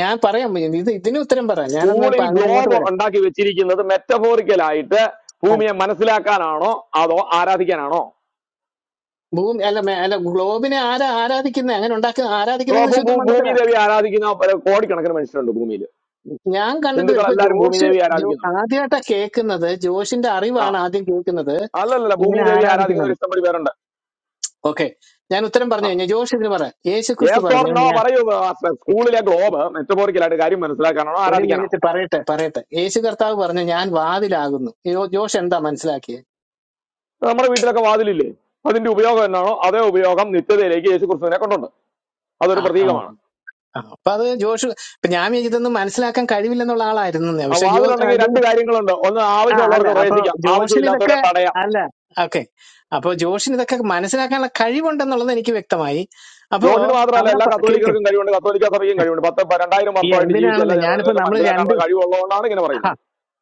Speaker 6: ഞാൻ പറയാം ഇത് ഇതിന് ഉത്തരം പറയാം ഞാനൊന്ന്
Speaker 4: സ്കൂളിൽ
Speaker 6: പ- അങ്ങനെ അങ്ങോട്ട്
Speaker 4: ഗ്ലോബ്
Speaker 6: വരാം
Speaker 4: ഉണ്ടാക്കി വെച്ചിരിക്കുന്നത് metaphorical ആയിട്ട്
Speaker 6: ആ,
Speaker 4: ഭൂമിയെ മനസ്സിലാക്കാനാണോ അതോ ആരാധിക്കാനാണോ
Speaker 6: ഭൂമി അല്ല മേ- അല്ല ഗ്ലോബിനെ ആരാ ആരാധിക്കുന്നത് അങ്ങനെ ഉണ്ടാക്കുന്ന
Speaker 4: ഓ,
Speaker 6: ആരാധിക്കുന്നെങ്കിൽ
Speaker 4: ഭൂ-
Speaker 6: ശുദ്ധ
Speaker 4: ഭൂ- ഭൂമി
Speaker 6: മണ്ടത്തരാ
Speaker 4: ദേവി ആരാധിക്കുന്ന പല- കോടിക്കണക്കിന് മനുഷ്യരുണ്ട് ഭൂമിയിൽ
Speaker 6: ഞാൻ കണ്ടിട്ടില്ല
Speaker 4: ഹിന്ദുക്കൾ
Speaker 6: ഇപ്പൊ
Speaker 4: എല്ലാവരും ഭൂമി
Speaker 6: ജോഷ്
Speaker 4: ദേവി
Speaker 6: ജോ
Speaker 4: ആരാധിക്കുന്നുണ്ട്
Speaker 6: ആദ്യമായിട്ടാ കേൾക്കുന്നത് ജോഷിന്റെ
Speaker 4: ആ
Speaker 6: അറിവാണ് ആദ്യം കേൾക്കുന്നത്
Speaker 4: അല്ലല്ല ഭൂമി
Speaker 6: ഇങ്ങനെ
Speaker 4: ദേവി ആരാധിക്കുന്ന
Speaker 6: ആരാധിക്കുന്നത്
Speaker 4: ഒരു ഇഷ്ടംപടി പേരുണ്ട്
Speaker 6: ഓക്കെ ഞാൻ ഉത്തരം പറഞ്ഞു
Speaker 4: ആ
Speaker 6: കഴിഞ്ഞാൽ ജോഷ് ഇതിന് പറയാം യേശു ക്രിസ്തു
Speaker 4: യെസ് ഓർ
Speaker 6: പറഞ്ഞു
Speaker 4: നോ
Speaker 6: ഞാൻ
Speaker 4: പറയൂ മാസ്റ്റർ സ്കൂളിലെ ഗ്ലോബ് മെറ്റബോറിക്കലായിട്ട് കാര്യം മനസ്സിലാക്കാനാണോ
Speaker 6: ഒരു
Speaker 4: ആരാധിക്കാനാണോ
Speaker 6: മിനിറ്റ് പറയട്ടെ പറയട്ടെ യേശു കർത്താവ് പറഞ്ഞു ഞാൻ വാതിലാകുന്നു ജോ- ജോഷ് എന്താ മനസ്സിലാക്കിയത്
Speaker 4: നമ്മുടെ വീട്ടിലൊക്കെ വാതിലില്ലേ അതിന്റെ ഉപയോഗം എന്നാണോ അതേ ഉപയോഗം നിത്യതയിലേക്ക് യേശു ക്രിസ്തുവിനെ കൊണ്ടുണ്ട് അതൊരു
Speaker 6: ആഹാ
Speaker 4: പ്രതീകമാണ്
Speaker 6: ആ, അപ്പൊ അത് ജോഷ് ഇപ്പൊ ഞാൻ വിചാരിച്ചു ഇതൊന്നും മനസ്സിലാക്കാൻ കഴിവില്ലെന്നുള്ള ആളായിരുന്നു ഞാൻ.
Speaker 4: ആ
Speaker 6: പക്ഷെ ജോ ആ,
Speaker 4: വാതിലുണ്ടെങ്കിൽ
Speaker 6: ജോ
Speaker 4: രണ്ട് കാര്യങ്ങളുണ്ട് ഒന്ന്
Speaker 6: ആ അല്ല
Speaker 4: ആവശ്യമുള്ളവർക്ക്
Speaker 6: അപ്പൊ
Speaker 4: പ്രവേശിക്കാം
Speaker 6: ജോഷിന് ഇതൊക്കെ
Speaker 4: ആവശ്യമില്ലാത്തവരെ തടയാം
Speaker 6: അല്ല ഓക്കെ അപ്പൊ ജോഷിന് ഇതൊക്കെ മനസ്സിലാക്കാനുള്ള കഴിവുണ്ടെന്നുള്ളത് എനിക്ക് വ്യക്തമായി അപ്പോ
Speaker 4: ജോഷിന് മാത്രമല്ല
Speaker 6: അവിടെ
Speaker 4: എല്ലാ
Speaker 6: പ- കേക്ക്
Speaker 4: കത്തോലിക്കർക്കും കഴിവുണ്ട് കത്തോലിക്ക സഭയ്ക്കും കഴിവുണ്ട് പത്ത് പ- രണ്ടായിരം
Speaker 6: ഈ
Speaker 4: വർഷമായിട്ട് ജീവിച്ച എല്ലാ
Speaker 6: എന്തിനാണെന്ന് ഞാനിപ്പോ
Speaker 4: ജനതകൾക്ക്
Speaker 6: നമ്മൾ രണ്ട്
Speaker 4: മനസ്സിലാക്കാനുള്ള കഴിവുള്ളതുകൊണ്ടാണ് ഇങ്ങനെ പറയുന്നത്
Speaker 6: ആ,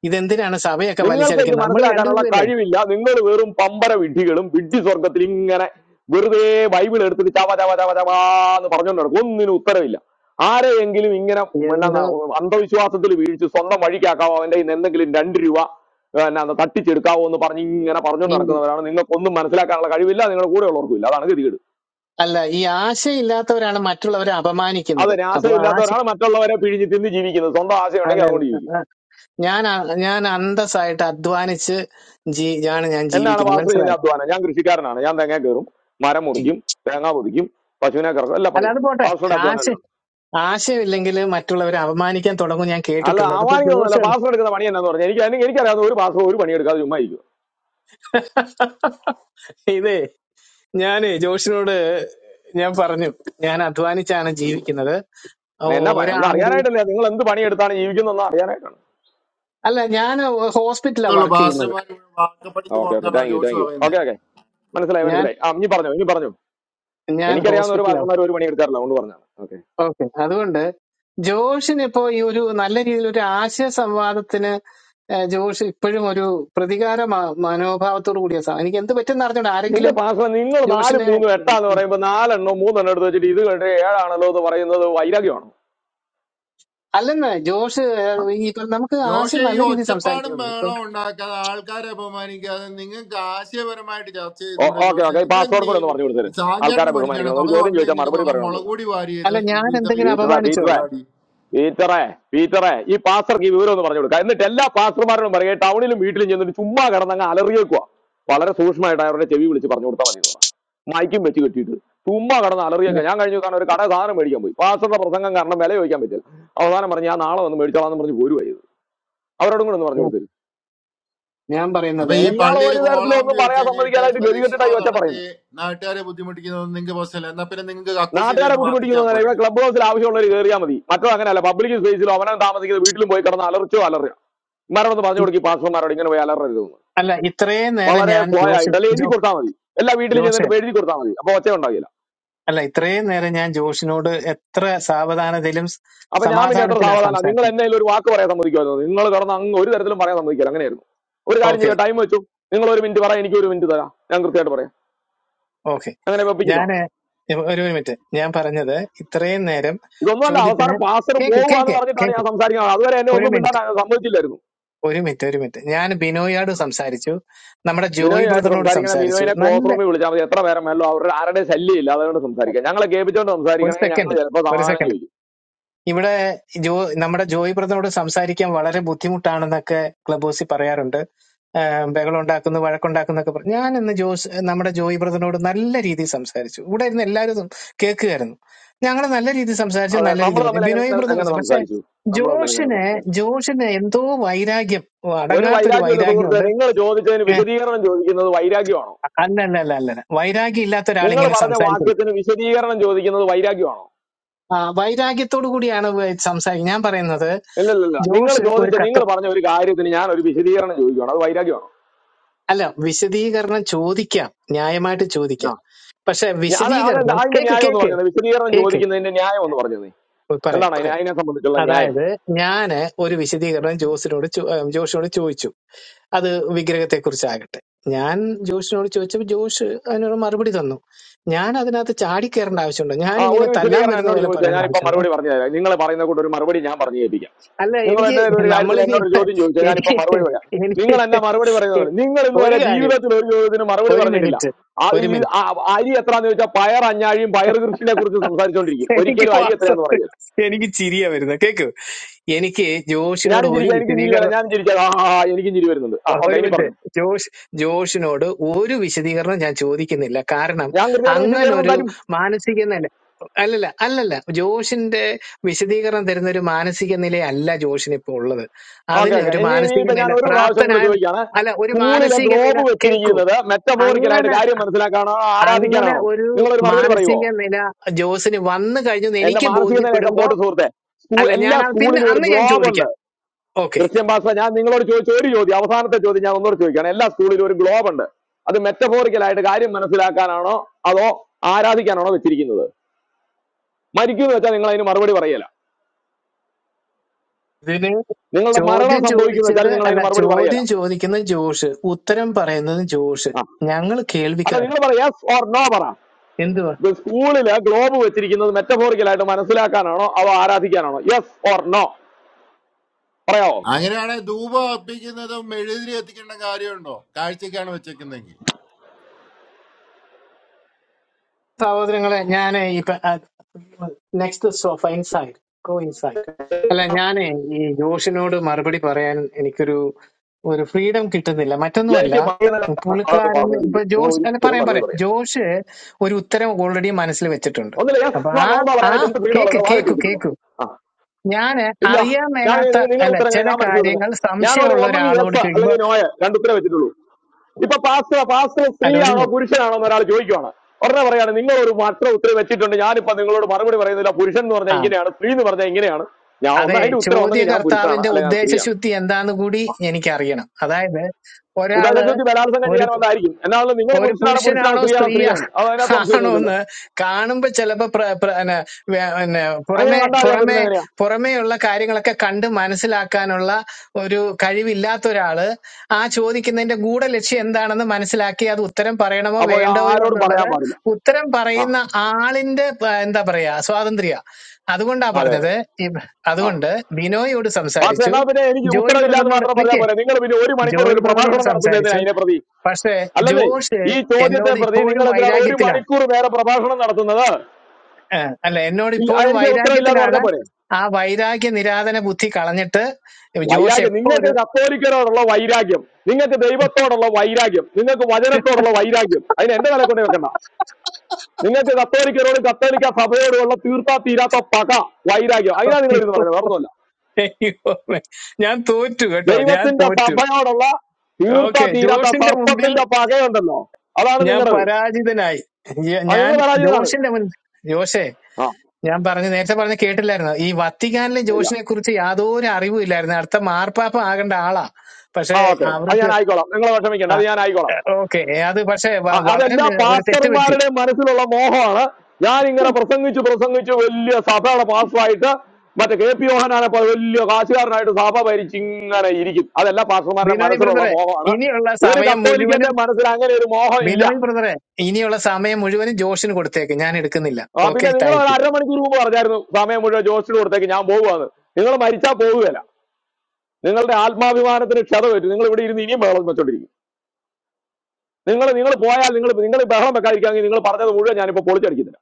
Speaker 6: ഇതെന്തിനാണ് സഭയൊക്കെ
Speaker 4: നിങ്ങൾക്ക് ഇത്
Speaker 6: വലിച്ചടക്കുന്നത് നമ്മൾ
Speaker 4: മനസ്സിലാക്കാനുള്ള
Speaker 6: രണ്ടുപേരല്ലേ
Speaker 4: കഴിവില്ല നിങ്ങൾ വെറും പമ്പര വിഡ്ഢികളും വിഡ്ഢി സ്വർഗത്തിൽ ഇങ്ങനെ വെറുതെ ബൈബിൾ എടുത്തിട്ട് ചവ ചവ ചവ ചവാന്ന് പറഞ്ഞുകൊണ്ട് നടക്കും ഒന്നിനും ഉത്തരവില്ല ആരെയെങ്കിലും ഇങ്ങനെ എന്നാ
Speaker 6: എന്തോ
Speaker 4: അന്ധവിശ്വാസത്തിൽ വീഴ്ച സ്വന്തം വഴിക്കാക്കാവോ അവന്റെ കയ്യിൽ നിന്ന് എന്തെങ്കിലും രണ്ട് രൂപ എന്നാ തട്ടിച്ചെടുക്കാവോ എന്ന് പറഞ്ഞ് ഇങ്ങനെ
Speaker 6: ഈ
Speaker 4: പറഞ്ഞുകൊണ്ട് നടക്കുന്നവരാണ് നിങ്ങൾക്കൊന്നും മനസ്സിലാക്കാനുള്ള കഴിവില്ല നിങ്ങളുടെ കൂടെ ഉള്ളവർക്കും ഇല്ല അതാണ് ഗതികേട്
Speaker 6: അല്ല ഈ ആശയില്ലാത്തവരാണ് മറ്റുള്ളവരെ അപമാനിക്കുന്നത്
Speaker 4: അതിന്
Speaker 6: അപ്പൊ ആശ
Speaker 4: ആശയമില്ലാത്തവരാണ് മറ്റുള്ളവരെ പിഴിഞ്ഞ് തിന്ന് ജീവിക്കുന്നത് സ്വന്തം ആശയം
Speaker 6: അല്ല
Speaker 4: ഉണ്ടെങ്കിൽ
Speaker 6: അല്ല,
Speaker 4: അതുകൊണ്ട് ജീവിക്കും
Speaker 6: ആ, ഞാൻ അ- ഞാൻ അന്തസ്സായിട്ട് അധ്വാനിച്ച് ജീ ആണ് ഞാൻ
Speaker 4: എന്നാണ്
Speaker 6: ജീവിക്കുന്നത്
Speaker 4: വാസു ചെയ്യുന്ന
Speaker 6: മനസ്സിലായി
Speaker 4: അധ്വാനം ഞാൻ കൃഷിക്കാരനാണ് ഞാൻ തേങ്ങ കയറും മരം
Speaker 6: ഉം.
Speaker 4: മുറിക്കും തേങ്ങ പൊതിക്കും പശുവിനെ കറക്കും എല്ലാ
Speaker 6: അല്ല അത്
Speaker 4: പണിയെടുക്കും
Speaker 6: പോട്ടെ
Speaker 4: പാസ്വേഡ് അധ്വാനം
Speaker 6: ആശ
Speaker 4: തന്നെയാണ്
Speaker 6: ആശയമില്ലെങ്കിൽ മറ്റുള്ളവരെ അപമാനിക്കാൻ തുടങ്ങും ഞാൻ
Speaker 4: അല്ല
Speaker 6: കേട്ടിട്ടുണ്ട് അതിപ്പോ
Speaker 4: ആവാനിക്കുന്നതല്ല
Speaker 6: ജോഷ്
Speaker 4: പാസ്വേഡ് എടുക്കുന്ന പണി എന്നാന്ന് പറഞ്ഞാൽ എനിക്ക് അതിന് എനിക്കറിയാവുന്ന ഒരു പാസ്വേഡ് ഒരു പണിയെടുക്കാതെ ചുമ്മാ ഇരിക്കും
Speaker 6: ഇതേ ഞാനേ ജോഷിനോട് ഞാൻ പറഞ്ഞു ഞാൻ അധ്വാനിച്ചാണ് ജീവിക്കുന്നത്
Speaker 4: ആ,
Speaker 6: ഒ-
Speaker 4: എന്നാ പണി ഒന്നും
Speaker 6: ഒരാളുടെ
Speaker 4: അറിയാനായിട്ടല്ലേ നിങ്ങൾ എന്ത് പണിയെടുത്താണ് ജീവിക്കുന്നതെന്ന് അറിയാനായിട്ടാണ്
Speaker 6: അല്ല ഞാൻ ഹോസ്പിറ്റലാ
Speaker 10: പുറത്തുള്ള
Speaker 6: വർക്ക് ചെയ്യുന്നത്
Speaker 10: ഭാഷമാർ വാക്കപ്പടിക്ക്
Speaker 4: ഓക്കെ ഓക്കെ
Speaker 10: പോകുന്നതാണോ
Speaker 4: thank you
Speaker 10: Josh
Speaker 4: thank you
Speaker 10: പറയുന്നത്
Speaker 4: ഓക്കെ ഓക്കെ മനസ്സിലായി
Speaker 6: ഞാൻ
Speaker 4: മനസ്സിലായി ആ ഇനി പറഞ്ഞോ ഇനി പറഞ്ഞു
Speaker 6: ഞാൻ
Speaker 4: എനിക്കറിയാവുന്ന ഒരു
Speaker 6: ഹോസ്പിറ്റലാ
Speaker 4: പാസ്വേഡ് ഒരു പണിയെടുക്കാറില്ല അതുകൊണ്ട് പറഞ്ഞാണ് ഓക്കെ
Speaker 6: ഓക്കെ അതുകൊണ്ട് ജോഷിന് ഇപ്പോ ഈ ഒരു നല്ല രീതിയിൽ ഒരു ആശയ സംവാദത്തിന് ഏഹ്, ജോഷ് ഇപ്പോഴും ഒരു പ്രതികാര മ- മനോഭാവത്തോട് കൂടിയ സാ- എനിക്ക് എന്ത് പറ്റുന്ന അറിഞ്ഞൂടാ
Speaker 4: എന്റെ
Speaker 6: ആരെങ്കിലും
Speaker 4: പാസ്വേഡ് നിങ്ങൾ നാലും
Speaker 6: ജോഷിനെ
Speaker 4: മൂന്നും എട്ടാന്ന് പറയുമ്പോൾ നാലെണ്ണോ മൂന്നെണ്ണം എടുത്ത് വെച്ചിട്ട് ഇത് കണ്ട് ഏഴാണല്ലോ എന്ന് പറയുന്നത് വൈരാഗ്യമാണ്
Speaker 6: അല്ലെന്ന് ജോഷ് ഏഹ്, ഈ ഇപ്പം നമുക്ക്
Speaker 10: ജോഷ
Speaker 6: ആശയം
Speaker 10: ഈ
Speaker 6: നല്ല രീതിയിൽ
Speaker 10: ഒച്ചപ്പാടും
Speaker 6: സംസാരിക്കാവുന്നു ഇപ്പൊ
Speaker 10: ബഹളവും ഉണ്ടാക്കാതെ ആൾക്കാരെ അപമാനിക്കാതെ നിങ്ങൾക്ക് ആശയപരമായിട്ട് ചർച്ച ചെയ്തുകൂടെ
Speaker 4: ഓക്കെ
Speaker 10: ജോഷ
Speaker 4: ഓക്കെ ഈ
Speaker 10: നിങ്ങൾ
Speaker 4: പാസ്വേഡ്
Speaker 10: എന്തിനാ
Speaker 4: കൂടെ ഒന്ന്
Speaker 10: ഈ
Speaker 4: പറഞ്ഞു
Speaker 10: ഈ
Speaker 4: കൊടുത്തരും ആൾക്കാരെ
Speaker 10: സാഞ്ചാട്ടിന് പഠിക്കാണ്
Speaker 4: ബഹുമാനിക്കണം ഒരു
Speaker 10: കുറെ
Speaker 4: ചോദ്യം
Speaker 10: വന്നു
Speaker 4: ചോദിച്ചാൽ
Speaker 10: കഴിഞ്ഞിട്ട്
Speaker 4: മറുപടി
Speaker 10: കുറെ
Speaker 4: പറയണമെന്ന് തോന്നുന്നു
Speaker 10: മുളകൂടി വാരി ഇത്
Speaker 6: അല്ല ഞാൻ എന്തെങ്കിലും
Speaker 10: ഇതൊക്കെയിട്ട്
Speaker 4: പീറ്ററെ
Speaker 10: പോകുന്ന
Speaker 6: അപമാനിച്ചോ
Speaker 4: പീറ്ററെ
Speaker 10: പരിപാടി
Speaker 4: പീറ്ററെ പീറ്ററെ ഈ പാസ്റ്റർക്ക് ഈ വിവരം ഒന്ന് പറഞ്ഞു കൊടുക്കുക എന്നിട്ട് എല്ലാ പാസ്റ്റർമാരോടും പറയുക ടൗണിലും വീട്ടിലും ചെന്നിട്ട് ചുമ്മാ കിടന്നങ്ങ് അലറിയേക്കുക വളരെ സൂക്ഷ്മമായിട്ട് അവരുടെ ചെവി വിളിച്ച് പറഞ്ഞു കൊടുത്താൽ മതി എന്ന് പറ മൈക്കും വെച്ച് കെട്ടിയിട്ട് ചുമ്മാ കിടന്ന് അലറിയൊക്കെ
Speaker 6: ഞ-
Speaker 4: ഞാൻ കഴിഞ്ഞ കാരണം ഒരു കട സാധനം മേടിക്കാൻ പോയി പാസ്റ്ററുടെ പ്രസംഗം കാരണം വില ചോദിക്കാൻ പറ്റില്ല അവസാനം പറഞ്ഞു ഞാൻ നാളെ വന്ന് മേടിച്ചോളാം എന്ന് പറഞ്ഞ് പോരുവായി അവരോടും കൂടെ ഒന്ന് പറഞ്ഞു
Speaker 6: ഞ-
Speaker 4: കൊടുത്തരും
Speaker 6: ഞാൻ
Speaker 10: അപ്പൊ
Speaker 6: പറയുന്നത്
Speaker 10: ഈ
Speaker 4: ഇയാൾ
Speaker 10: പള്ളിയിൽ
Speaker 4: ഒരു തരത്തിലും
Speaker 10: കോളാമ്പി
Speaker 4: ഒന്നും
Speaker 10: വെച്ച്
Speaker 4: പറയാൻ
Speaker 10: കഴിഞ്ഞിട്ട്
Speaker 4: സമ്മതിക്കാനായിട്ട് ഗതി കെട്ടിട്ടായി
Speaker 10: പ്രദക്ഷിണവും
Speaker 4: ഒച്ച പറയുന്നത്
Speaker 10: നടത്തി നാട്ടുകാരെ ബുദ്ധിമുട്ടിക്കുന്നതൊന്നും നിങ്ങൾക്ക് പ്രശ്നമില്ല എന്നാ പിന്നെ നിങ്ങൾക്ക്
Speaker 4: നാട്ടുകാരെ
Speaker 10: കക്കൂസിലിരുന്ന് പ്രാർത്ഥിച്ചാ
Speaker 4: ബുദ്ധിമുട്ടിക്കുന്നതല്ല
Speaker 10: പോരെ
Speaker 4: ഇവിടെ ക്ലബ് ഹൗസിൽ ആവശ്യമുള്ളവർ കയറിയാൽ മതി മറ്റോ അങ്ങനെയല്ല പബ്ലിക് സ്പേസിലോ അവനെ താമസിക്കുന്ന വീട്ടിലും പോയി കിടന്ന് അലർച്ചയോ അലറുക ഇമാരോടൊന്ന് പറഞ്ഞു
Speaker 6: ഇ-
Speaker 4: കൊടുക്കി പാസ്റ്റർമാരോട് ഇങ്ങനെ പോയി അലറരുതെന്ന്
Speaker 6: അല്ല ഇത്രയും നേരം
Speaker 4: വളരെ
Speaker 6: ഞാൻ
Speaker 4: സ്ലോ
Speaker 6: ജോഷ്
Speaker 4: ആയിട്ട് അല്ലെങ്കിൽ എഴുതി
Speaker 6: ജോ
Speaker 4: കൊടുത്താൽ മതി എല്ലാ വീട്ടിലും ചെന്നിട്ട്
Speaker 6: ജോഷ്
Speaker 4: എഴുതി കൊടുത്താൽ മതി അപ്പൊ ഒച്ച ഉണ്ടാകില്ല
Speaker 6: അല്ല ഇത്രയും നേരം ഞാൻ ജോഷിനോട് എത്ര സാവധാനതയിലും
Speaker 4: അപ്പൊ ഞാൻ പിന്നെ എത്ര
Speaker 6: സമാധാനത്തിലാണ്
Speaker 4: സാവധാനം നിങ്ങൾ
Speaker 6: സംസാരിച്ചത്
Speaker 4: എന്നെങ്കിലും ഒരു വാക്ക് പറയാൻ സമ്മതിക്കുമായിരുന്നു നിങ്ങൾ കിടന്ന് അങ്ങ് ഒരു തരത്തിലും പറയാൻ സമ്മതിക്കില്ല അങ്ങനെയായിരുന്നു ഒരു കാര്യം
Speaker 6: ഓക്കെ
Speaker 4: ചെയ്യാം ടൈം വെച്ചു നിങ്ങൾ ഒരു മിനിറ്റ് പറയാം എനിക്ക് ഒരു മിനിറ്റ് തരാം ഞാൻ കൃത്യമായിട്ട് പറയാം
Speaker 6: ഓക്കെ
Speaker 4: അങ്ങനെ വെപ്പിക്കുന്നോ
Speaker 6: ഞാന് ഇപ്പ- ഒരു മിനിറ്റ് ഞാൻ പറഞ്ഞത് ഇത്രയും നേരം
Speaker 4: ഇതൊന്നുമല്ല
Speaker 6: ചോദ്യത്തിന്
Speaker 4: അവസാനം പാസ്റ്റർ
Speaker 6: കേക്ക്
Speaker 4: പോകുക എന്ന്
Speaker 6: കേക്ക്
Speaker 4: പറഞ്ഞിട്ടാണ്
Speaker 6: കേക്ക്
Speaker 4: ഞാൻ സംസാരിക്കുന്നത് അതുവരെ എന്നെ
Speaker 6: ഒരു
Speaker 4: ഒന്നും മിണ്ടാൻ
Speaker 6: മിനിറ്റ്
Speaker 4: സമ്മതിച്ചില്ലായിരുന്നു
Speaker 6: ഒരു മിനിറ്റ് ഒരു മിനിറ്റ് ഞാൻ ബിനോയോട് സംസാരിച്ചു നമ്മുടെ ജോയി
Speaker 4: ബിനോയായിട്ട്
Speaker 6: ബ്രദറിനോട്
Speaker 4: സംസാരിക്കണം
Speaker 6: സംസാരിച്ചു
Speaker 4: ബിനോയിനെ ക്ലോസ്
Speaker 6: നല്ല
Speaker 4: റൂമിൽ വിളിച്ചാൽ മതി എത്ര പേരെ മേലോ അവരുടെ ആരുടെ ശല്യമില്ല അതുകൊണ്ട് സംസാരിക്കാം ഞങ്ങളെ കേൾപ്പിച്ചോണ്ട്
Speaker 6: ഒരു
Speaker 4: സംസാരിക്കണമെങ്കിൽ ഞങ്ങൾ
Speaker 6: സെക്കൻഡ്
Speaker 4: ചിലപ്പോൾ
Speaker 6: ഒരു
Speaker 4: സമാധാനം
Speaker 6: സെക്കൻഡ്
Speaker 4: ചോദിക്കും
Speaker 6: ഇവിടെ ജോ നമ്മുടെ ജോയി ബ്രദർ ഇവിടെ സംസാരിക്കാൻ വളരെ ബുദ്ധിമുട്ടാണെന്നൊക്കെ ക്ലബ് ഹൗസിൽ പറയാറുണ്ട് ആഹ് ബഹളമുണ്ടാക്കുന്നു വഴക്കുണ്ടാക്കുന്നൊക്കെ പറഞ്ഞു ഞാൻ ഇന്ന് ജോസ് നമ്മുടെ ജോയി ബ്രദറിനോട് നല്ല രീതിയിൽ സംസാരിച്ചു ഇവിടെ ഇരുന്ന് എല്ലാവരും കേൾക്കുകയായിരുന്നു ഞങ്ങൾ നല്ല രീതിയിൽ സംസാരിച്ചു
Speaker 4: അതെ
Speaker 6: നല്ല
Speaker 4: നമ്മൾ
Speaker 6: രീതിയിൽ പറഞ്ഞു
Speaker 4: തമ്മിൽ എങ്ങനെ
Speaker 6: ബിനോയ് ബ്രദർ
Speaker 4: എങ്ങനെ
Speaker 6: പറഞ്ഞു പക്ഷെ
Speaker 4: സംസാരിച്ചു നമ്മൾ തമ്മിൽ എങ്ങനെ
Speaker 6: ജോഷിന്
Speaker 4: സംസാരിച്ചു
Speaker 6: ജോഷിന് എന്തോ വൈരാഗ്യം ഓ,
Speaker 4: ഒരു
Speaker 6: അടങ്ങാത്തൊരു
Speaker 4: വൈരാഗ്യമില്ല സുഹൃത്തെ
Speaker 6: വൈരാഗ്യമുണ്ട്
Speaker 4: നിങ്ങൾ ചോദിച്ചതിന്
Speaker 6: ഏഹ്,
Speaker 4: വിശദീകരണം ചോദിക്കുന്നത് വൈരാഗ്യമാണോ
Speaker 6: അല്ല അല്ല അല്ല അല്ല അല്ല. വൈരാഗ്യം ഇല്ലാത്ത ഒരാൾ
Speaker 4: നിങ്ങൾ
Speaker 6: ഇങ്ങനെ
Speaker 4: പറഞ്ഞ
Speaker 6: സംസാരിക്കുന്നു
Speaker 4: വാക്യത്തിന് വിശദീകരണം ചോദിക്കുന്നത് വൈരാഗ്യമാണോ
Speaker 6: ആ വൈരാഗ്യത്തോടു കൂടിയാണ് സംസാരിക്കുന്നത് ഞാൻ പറയുന്നത്
Speaker 4: ഇല്ലല്ലല്ല നിങ്ങൾ
Speaker 6: ജോഷ് ഒരു
Speaker 4: ചോദിച്ച
Speaker 6: കത്ത്
Speaker 4: നിങ്ങൾ പറഞ്ഞ ഒരു കാര്യത്തിന് ഞാൻ ഒരു വിശദീകരണം ചോദിക്കുകയാണ് അത് വൈരാഗ്യമാണോ
Speaker 6: അല്ല വിശദീകരണം ചോദിക്കാം ന്യായമായിട്ട്
Speaker 4: ആ
Speaker 6: ചോദിക്കാം പക്ഷെ
Speaker 4: ഞാ- അത് അതെന്താ
Speaker 6: വിശദീകരണം
Speaker 4: അതിന്റെ
Speaker 6: കേക്ക്
Speaker 4: ന്യായം എന്ന്
Speaker 6: കേക്ക്
Speaker 4: പറഞ്ഞത് വിശദീകരണം
Speaker 6: കേക്ക്
Speaker 4: ചോദിക്കുന്നതിന്റെ ന്യായം എന്ന് പറഞ്ഞത്
Speaker 6: ഉം, പറയാം
Speaker 4: എന്താണ് അതിനെ
Speaker 6: പറയാം
Speaker 4: അതിനെ സംബന്ധിച്ചുള്ള ന്യായം
Speaker 6: അതായത് ഞാന് ഒരു വിശദീകരണം ജോസിനോട് ചോ- ഏം, ജോഷിനോട് ചോദിച്ചു അത് വിഗ്രഹത്തെ കുറിച്ചാകട്ടെ ഞാൻ ജോഷിനോട് ചോദിച്ചപ്പോൾ ജോഷ് അതിനൊരു മറുപടി തന്നു ഞാൻ അതിനകത്ത് ചാടിക്കേറേണ്ട ആവശ്യമുണ്ടോ ഞാൻ
Speaker 4: ആ
Speaker 6: ഇങ്ങനെ
Speaker 4: ഒരു
Speaker 6: തല്ലാൻ
Speaker 4: വിശദീകരണം
Speaker 6: വരുന്ന
Speaker 4: എന്നോട്
Speaker 6: പോലെ
Speaker 4: ചോദിച്ചാൽ
Speaker 6: പറയേണ്ട
Speaker 4: ഞാനിപ്പോ
Speaker 6: ആവശ്യമുണ്ടോ
Speaker 4: മറുപടി പറഞ്ഞു തരാം നിങ്ങൾ പറയുന്ന കൂട്ട് ഒരു മറുപടി ഞാൻ പറഞ്ഞു കേൾപ്പിക്കാം
Speaker 6: അല്ല
Speaker 4: നിങ്ങൾ
Speaker 6: എനിക്ക്
Speaker 4: എന്തെങ്കിലും ഒരു കാര്യത്തിൽ
Speaker 6: നമ്മളിനി
Speaker 4: എന്നോട് ഒരു ചോദ്യം ചോദിച്ചാൽ ഞാനിപ്പോ
Speaker 6: എനിക്ക്
Speaker 4: മറുപടി പറയാം നിങ്ങൾ
Speaker 6: എനിക്ക്
Speaker 4: എന്നാ മറുപടി പറയുന്നത് നിങ്ങൾ ഇന്ന്
Speaker 6: ഒരു
Speaker 4: വരെ
Speaker 6: കാര്യം
Speaker 4: ജീവിതത്തിൽ ഒരു ചോദ്യത്തിന് മറുപടി
Speaker 6: ഒരു
Speaker 4: പറഞ്ഞിട്ടില്ല
Speaker 6: മിനിറ്റ്
Speaker 4: ആ
Speaker 6: ഒരു
Speaker 4: ഈ
Speaker 6: മിനിറ്റ്
Speaker 4: ആ- അരി എത്രാന്ന് ചോദിച്ചാൽ പയർ അഞ്ഞാഴിയും പയർ കൃഷിനെ കുറിച്ച് സംസാരിച്ചുകൊണ്ടിരിക്കും
Speaker 6: എനിക്ക്
Speaker 4: ഒരിക്കലും അരി എത്രയാന്ന് പറയുക
Speaker 6: വാസ്തവത്തിൽ എനിക്ക് ചിരിയാ വരുന്നത് കേക്ക് എനിക്ക് ജോഷിനോട്
Speaker 4: ഞാനും
Speaker 6: ഒരു
Speaker 4: ചിരിക്കാം എനിക്കും ചിരി വരാം
Speaker 6: വിശദീകരണം
Speaker 4: ഞാനും ചിരിക്കാം ആ ആ, ആ, എനിക്കും ചിരി വരുന്നുണ്ട് ആ ഓക്കെ
Speaker 6: ഒരു
Speaker 4: ഇനി
Speaker 6: മിനിറ്റ്
Speaker 4: പറഞ്ഞു
Speaker 6: ജോഷ് ജോഷിനോട് ഒരു വിശദീകരണം ഞാൻ ചോദിക്കുന്നില്ല കാരണം
Speaker 4: ഞാൻ കൃത്യമായിട്ട് വിശദീകരണം
Speaker 6: അങ്ങനൊരു
Speaker 4: തരും
Speaker 6: മാനസിക നില അല്ലല്ല അല്ലല്ല ജോഷിന്റെ വിശദീകരണം തരുന്ന ഒരു മാനസിക നിലയല്ല ജോഷിന് ഇപ്പൊ ഉള്ളത്
Speaker 4: ഓക്കെ
Speaker 6: അതിന്
Speaker 4: ഓക്കെ
Speaker 6: ഒരു
Speaker 4: ഇനി
Speaker 6: മാനസിക
Speaker 4: ഇനിയിപ്പോ ഞാൻ
Speaker 6: നില
Speaker 4: ഒരു പ്രാവശ്യം കൂടെ
Speaker 6: പ്രാപ്തനായ
Speaker 4: ചോദിക്കാണ്
Speaker 6: അല്ല ഒരു
Speaker 4: സ്കൂളിലെ
Speaker 6: മാനസിക നില
Speaker 4: ഗ്ലോബ്
Speaker 6: കേൾക്കൂ
Speaker 4: വെച്ചിരിക്കുന്നത് metaphorical ആയിട്ട്
Speaker 6: അങ്ങനെ
Speaker 4: കാര്യം മനസ്സിലാക്കാനോ
Speaker 6: അങ്ങനെ
Speaker 4: ആരാധിക്കാനാണോ
Speaker 6: ഒരു
Speaker 4: നിങ്ങൾ ഒരു മറുപടി പറയുമോ
Speaker 6: മാനസിക നില ജോസിന് വന്നു കഴിഞ്ഞു എന്ന്
Speaker 4: എന്റെ
Speaker 6: എനിക്ക്
Speaker 4: മാനസികതയിലൊക്കെ
Speaker 6: ബോധ്യപ്പെടുമ്പോ
Speaker 4: പോട്ട് സുഹൃത്തെ സ്കൂൾ
Speaker 6: അല്ല
Speaker 4: എല്ലാ
Speaker 6: ഞാൻ ആ- പിന്നെ
Speaker 4: സ്കൂളിലും ഒരു
Speaker 6: അന്ന് ഞാൻ
Speaker 4: ഗ്ലോബ് ഉണ്ട്
Speaker 6: ചോദിക്കാം ഓക്കെ
Speaker 4: ക്രിസ്ത്യൻ ഭാഷ ഞാൻ നിങ്ങളോട് ചോദിച്ച ഒരു ചോദ്യം അവസാനത്തെ ചോദ്യം ഞാൻ ഒന്നുകൂടെ ചോദിക്കുകയാണ് എല്ലാ സ്കൂളിലും ഒരു ഗ്ലോബ് ഉണ്ട് അത് metaphorical ആയിട്ട് കാര്യം മനസ്സിലാക്കാനാണോ അതോ ആരാധിക്കാനാണോ വെച്ചിരിക്കുന്നത് മരിക്കുന്നു വെച്ചാൽ നിങ്ങൾ അതിന് മറുപടി പറയല
Speaker 6: ഇതിന്
Speaker 4: നിങ്ങളുടെ മരണം
Speaker 6: ചോദ്യം
Speaker 4: സംഭവിക്കുന്നു വെച്ചാൽ
Speaker 6: ചോദിച്ചത്
Speaker 4: നിങ്ങൾ
Speaker 6: അല്ല
Speaker 4: അതിന് മറുപടി പറയല
Speaker 6: ചോദ്യം ചോദിക്കുന്നത് ജോഷ് ഉത്തരം പറയുന്നത് ജോഷ്
Speaker 4: ആ
Speaker 6: ഞങ്ങൾ
Speaker 4: അല്ല
Speaker 6: കേൾവിക്കാരൻ
Speaker 4: നിങ്ങൾ പറ യെസ് ഓർ നോ പറ
Speaker 6: എന്തുവാ
Speaker 4: സ്കൂളില് ഗ്ലോബ് വെച്ചിരിക്കുന്നത് മെറ്റഫോറിക്കൽ ആയിട്ട് മനസ്സിലാക്കാനാണോ അവ ആരാധിക്കാനാണോ യെസ് ഓർ നോ പറയാവോ
Speaker 10: അങ്ങനെയാണെങ്കിൽ ധൂപം അർപ്പിക്കുന്നതും മെഴുതിരി എത്തിക്കേണ്ട കാര്യമുണ്ടോ കാഴ്ചക്കാണ് വെച്ചേക്കുന്നെങ്കിൽ
Speaker 6: സഹോദരങ്ങളെ ഞാൻ next sofa inside go inside അല്ല ഞാൻ ഈ ജോഷിനോട് മറുപടി പറയാൻ എനിക്കൊരു ഒരു ഫ്രീഡം കിട്ടുന്നില്ല മറ്റൊന്നുമല്ല
Speaker 4: എനിക്ക് പറയുന്നതിനകത്താണ് അവരൊക്കെ
Speaker 6: പുള്ളിക്കാരൻ ഇപ്പൊ
Speaker 4: പറഞ്ഞുകൊണ്ടിരിക്കും നിങ്ങൾ
Speaker 6: ജോഷ് അല്ല
Speaker 4: ഒരിക്കലും
Speaker 6: പറയാം
Speaker 4: മറുപടി
Speaker 6: പറയാം
Speaker 4: പറയാൻ
Speaker 6: ജോഷ് ഒരു ഉത്തരം ഓൾറെഡി മനസ്സിൽ വെച്ചിട്ടുണ്ട്
Speaker 4: ഒന്നില്ല യെസ്
Speaker 6: അപ്പൊ ആ
Speaker 4: നോ എന്നാ
Speaker 6: ആ
Speaker 4: പറയാനായിട്ട് എന്ത് ഫ്രീഡം ഉള്ളത്
Speaker 6: കേക്ക്
Speaker 4: നിങ്ങൾ വാ കെട്ടി
Speaker 6: കേക്കു
Speaker 4: വെച്ചിട്ടുണ്ടോ
Speaker 6: കേക്കു
Speaker 4: ആ
Speaker 6: ഞാന്
Speaker 4: ഇല്ല
Speaker 6: അറിയാൻ
Speaker 4: ഞാൻ
Speaker 6: മേലാത്ത
Speaker 4: നിങ്ങളുടെ
Speaker 6: അല്ല
Speaker 4: ഉത്തരം എങ്ങനെ
Speaker 6: ചില
Speaker 4: ഞാൻ മനസ്സിൽ
Speaker 6: കാര്യങ്ങൾ
Speaker 4: വെക്കുന്നത് ഞാൻ ഒരു
Speaker 6: സംശയമുള്ള
Speaker 4: ഒന്നെങ്കിൽ
Speaker 6: ഒരാളോട്
Speaker 4: യെസ്
Speaker 6: ചോദിക്കുമ്പോ
Speaker 4: അല്ലെങ്കിൽ നോയ രണ്ടുത്തരം വെച്ചിട്ടുള്ളൂ ഇപ്പൊ പാസ്റ്റർ പാസ്റ്റർ
Speaker 6: അല്ല ഒരു
Speaker 4: സ്ത്രീയാണോ
Speaker 6: മിനിറ്റ്
Speaker 4: പുരുഷനാണോ എന്ന് ഒരാൾ ചോദിക്കുവാണ് ഉടനെ പറയാണ് നിങ്ങൾ ഒരു മാത്രം ഉത്തരം വെച്ചിട്ടുണ്ട് ഞാനിപ്പോ നിങ്ങളോട് മറുപടി പറയുന്നില്ല പുരുഷൻ എന്ന് പറഞ്ഞാൽ
Speaker 6: ആ
Speaker 4: ഇങ്ങനെയാണ് സ്ത്രീ എന്ന് പറഞ്ഞാൽ ഇങ്ങനെയാണ് ഞാൻ ഒന്ന്
Speaker 6: അതെ
Speaker 4: അതിന്റെ ഉത്തരം ഒന്നെങ്കിൽ ഞാൻ പുരുഷനാണ്
Speaker 6: ചോദ്യകർത്താവിന്റെ
Speaker 4: അല്ലെങ്കിൽ ഞാൻ സ്ത്രീയാണ്
Speaker 6: ഉദ്ദേശശുദ്ധി എന്താന്ന് കൂടി എനിക്കറിയണം അതായത് ഒരാള്
Speaker 4: ഉദാഹരണത്തിൽ ബലാത്സംഗം ചെയ്യാൻ
Speaker 6: ഒരു
Speaker 4: വന്നായിരിക്കും എന്നാണല്ലോ നിങ്ങൾ
Speaker 6: ഒരു
Speaker 4: പുരുഷനാണ് പുരുഷനാണ്
Speaker 6: പുരുഷനാണോ
Speaker 4: സ്ത്രീയാണ്
Speaker 6: സ്ത്രീ
Speaker 4: സ്ത്രീയാണ് അത് അതിനകത്ത്
Speaker 6: ആണോ
Speaker 4: സംശയമൊന്നുമില്ലല്ലോ
Speaker 6: എന്ന് കാണുമ്പോ ചിലപ്പോ പ്ര- പ്ര- ന- വേ- ന-
Speaker 4: അങ്ങനെ
Speaker 6: പുറമെ
Speaker 4: കണ്ടറിയാൻ
Speaker 6: പുറമെ
Speaker 4: പറ്റുന്ന എങ്ങനെയാ
Speaker 6: പുറമേയുള്ള കാര്യങ്ങളൊക്കെ കണ്ട് മനസ്സിലാക്കാനുള്ള ഒരു കഴിവില്ലാത്ത ഒരാള് ആ ചോദിക്കുന്നതിന്റെ ഗൂഢ ലക്ഷ്യം എന്താണെന്ന് മനസ്സിലാക്കി അത് ഉത്തരം പറയണമോ
Speaker 4: അപ്പൊ ആ-
Speaker 6: വേണ്ടോയോ
Speaker 4: ആരോട് പറയാൻ
Speaker 6: എന്നുള്ളത്
Speaker 4: പാടില്ല
Speaker 6: ഉത്തരം
Speaker 4: ആ
Speaker 6: പറയുന്ന ആളിന്റെ പ- എന്താ പറയാ സ്വാതന്ത്ര്യ അതുകൊണ്ടാ
Speaker 4: അതെ അതെ
Speaker 6: പറഞ്ഞത് ഇ-
Speaker 4: ആ
Speaker 6: അതുകൊണ്ട് ബിനോയോട്
Speaker 4: മാസ്റ്റർ
Speaker 6: സംസാരിച്ചു
Speaker 4: എന്നാ പിന്നെ എനിക്ക്
Speaker 6: ജോയ്
Speaker 4: ഉത്തരവില്ല എന്ന്
Speaker 6: ബ്രദറിനോട്
Speaker 4: മാത്രം പറഞ്ഞാൽ
Speaker 6: നിക്കേ
Speaker 4: പോരെ നിങ്ങൾ പിന്നെ ഒരു മണിക്കൂർ
Speaker 6: ജോയ്
Speaker 4: ഒരു
Speaker 6: ബ്രദറിനോട്
Speaker 4: പ്രഭാഷണം നടത്തുന്നത്
Speaker 6: സംസാരിച്ചു
Speaker 4: അതിനെ പ്രതി
Speaker 6: പക്ഷേ
Speaker 4: അല്ലല്ലേ
Speaker 6: ജോഷ്
Speaker 4: ഈ ചോദ്യത്തെ
Speaker 6: എന്നോട്
Speaker 4: പ്രതി
Speaker 6: ഇപ്പോഴും
Speaker 4: നിങ്ങൾ എന്തിനാണ് ഒരു
Speaker 6: വൈരാഗ്യത്തിലാണ്
Speaker 4: മണിക്കൂർ നേരെ പ്രഭാഷണം നടത്തുന്നത്
Speaker 6: ഏ, അല്ല എന്നോട്
Speaker 4: ഇല്ല, ആ,
Speaker 6: ഇപ്പോഴും
Speaker 4: എനിക്ക് ഉത്തരവില്ല എന്ന്
Speaker 6: വൈരാഗ്യത്തിലാണ്
Speaker 4: പറഞ്ഞാൽ പോരെ
Speaker 6: ആ വൈരാഗ്യ നിരാധന ബുദ്ധി കളഞ്ഞിട്ട് ജോഷ്
Speaker 4: വൈരാഗ്യം
Speaker 6: എപ്പോ
Speaker 4: നിങ്ങൾക്ക്
Speaker 6: ഒരു
Speaker 4: കത്തോലിക്കരോടുള്ള വൈരാഗ്യം നിങ്ങൾക്ക് ദൈവത്തോടുള്ള വൈരാഗ്യം നിങ്ങൾക്ക് വചനത്തോടുള്ള വൈരാഗ്യം അതിന് എന്റെ നില കൊണ്ട് വെക്കണ്ട നിങ്ങൾക്ക് കത്തോലിക്കരോട് കത്തോലിക്ക സഭയോടുള്ള തീർത്താ തീരാത്ത പക വൈരാഗ്യം അതിനാണ് നിങ്ങൾ ഇരുന്ന്
Speaker 6: അയ്യോ,
Speaker 4: പറയുന്നത് ഓർമ്മല്ല
Speaker 6: ദൈവമേ. ഞാൻ തോറ്റു കേട്ടോ ഞാൻ
Speaker 4: ദൈവത്തിന്റെ
Speaker 6: തോറ്റു
Speaker 4: സഭയോടുള്ള തീർത്താ
Speaker 6: ഓക്കെ
Speaker 4: തീരാത്ത
Speaker 6: ജോഷിന്റെ മുമ്പിൽ
Speaker 4: സർപ്പത്തിന്റെ പകയുണ്ടല്ലോ അതാണ്
Speaker 6: ഞാൻ
Speaker 4: നിങ്ങളത്
Speaker 6: പരാജിതനായി ഞ-
Speaker 4: ആ
Speaker 6: ഞാൻ
Speaker 4: നിങ്ങൾ പരാജിതനാണ്
Speaker 6: ജോഷിന്റെ മുൻ ജോഷേ
Speaker 4: ആ
Speaker 6: ഞാൻ പറഞ്ഞു നേരത്തെ പറഞ്ഞ കേട്ടില്ലായിരുന്നു ഈ വത്തിക്കാനിലെ
Speaker 4: ഇല്ല
Speaker 6: ജോഷിനെ കുറിച്ച് യാതൊരു അറിവും ഇല്ലായിരുന്നു അടുത്ത മാർപ്പാപ്പ ആകേണ്ട ആളാ പക്ഷെ
Speaker 4: ആ ഓക്കെ അത്
Speaker 6: അവർക്ക്
Speaker 4: ഞാൻ ആയിക്കോളാം നിങ്ങൾ വിഷമിക്കേണ്ട അത് ഞാൻ ആയിക്കോളാം
Speaker 6: ഓക്കെ അത് പക്ഷെ വ-
Speaker 4: അ-
Speaker 6: വളരെ
Speaker 4: അതെല്ലാ
Speaker 6: മി- ഒരു തെറ്റ് പറ്റി
Speaker 4: പാസ്റ്റർമാരുടെയും മനസ്സിലുള്ള മോഹമാണ് ഞാൻ ഇങ്ങനെ പ്രസംഗിച്ചു പ്രസംഗിച്ചു വലിയ സഭയുടെ പാസ്റ്ററായിട്ട് മറ്റേ കെ പി യോഹനാനെ പോലെ വലിയ കാശുകാരനായിട്ട് സഭ ഭരിച്ച് ഇങ്ങനെ ഇരിക്കും അതെല്ലാ പാസ്റ്റർമാരുടെ
Speaker 6: ബിനോയ്
Speaker 4: മനസ്സിലുള്ള
Speaker 6: ബ്രദറെ
Speaker 4: മോഹമാണ്
Speaker 6: ഇനിയുള്ള
Speaker 4: ഒരു
Speaker 6: സമയം
Speaker 4: കത്തോലിക്കന്റെ
Speaker 6: മുഴുവനും
Speaker 4: മനസ്സിൽ അങ്ങനെ ഒരു മോഹം ഇല്ല
Speaker 6: ബിനോയ് ബ്രദറെ ഇനിയുള്ള സമയം മുഴുവനും ജോഷിന് കൊടുത്തേക്ക് ഞാൻ എടുക്കുന്നില്ല
Speaker 4: ആ, പിന്നെ
Speaker 6: ഓക്കെ
Speaker 4: നിങ്ങൾ ഒരു
Speaker 6: താങ്ക്
Speaker 4: അരമണിക്കൂർ മുമ്പ് പറഞ്ഞായിരുന്നു സമയം മുഴുവൻ ജോസിന് കൊടുത്തേക്ക് ഞാൻ പോകുവാന്ന് നിങ്ങൾ മരിച്ചാൽ പോകുകയല്ല നിങ്ങളുടെ ആത്മാഭിമാനത്തിന് ക്ഷത പറ്റും നിങ്ങൾ ഇവിടെ ഇരുന്ന് ഇനിയും ബഹളം വെച്ചോണ്ടിരിക്കും നിങ്ങൾ നിങ്ങൾ പോയാൽ നിങ്ങൾ നിങ്ങൾ ബഹളം വെക്കാതിരിക്കുകയാണെങ്കിൽ നിങ്ങൾ പറഞ്ഞത് മുഴുവൻ ഞാനിപ്പോൾ പൊളിച്ചടിക്കുന്നില്ല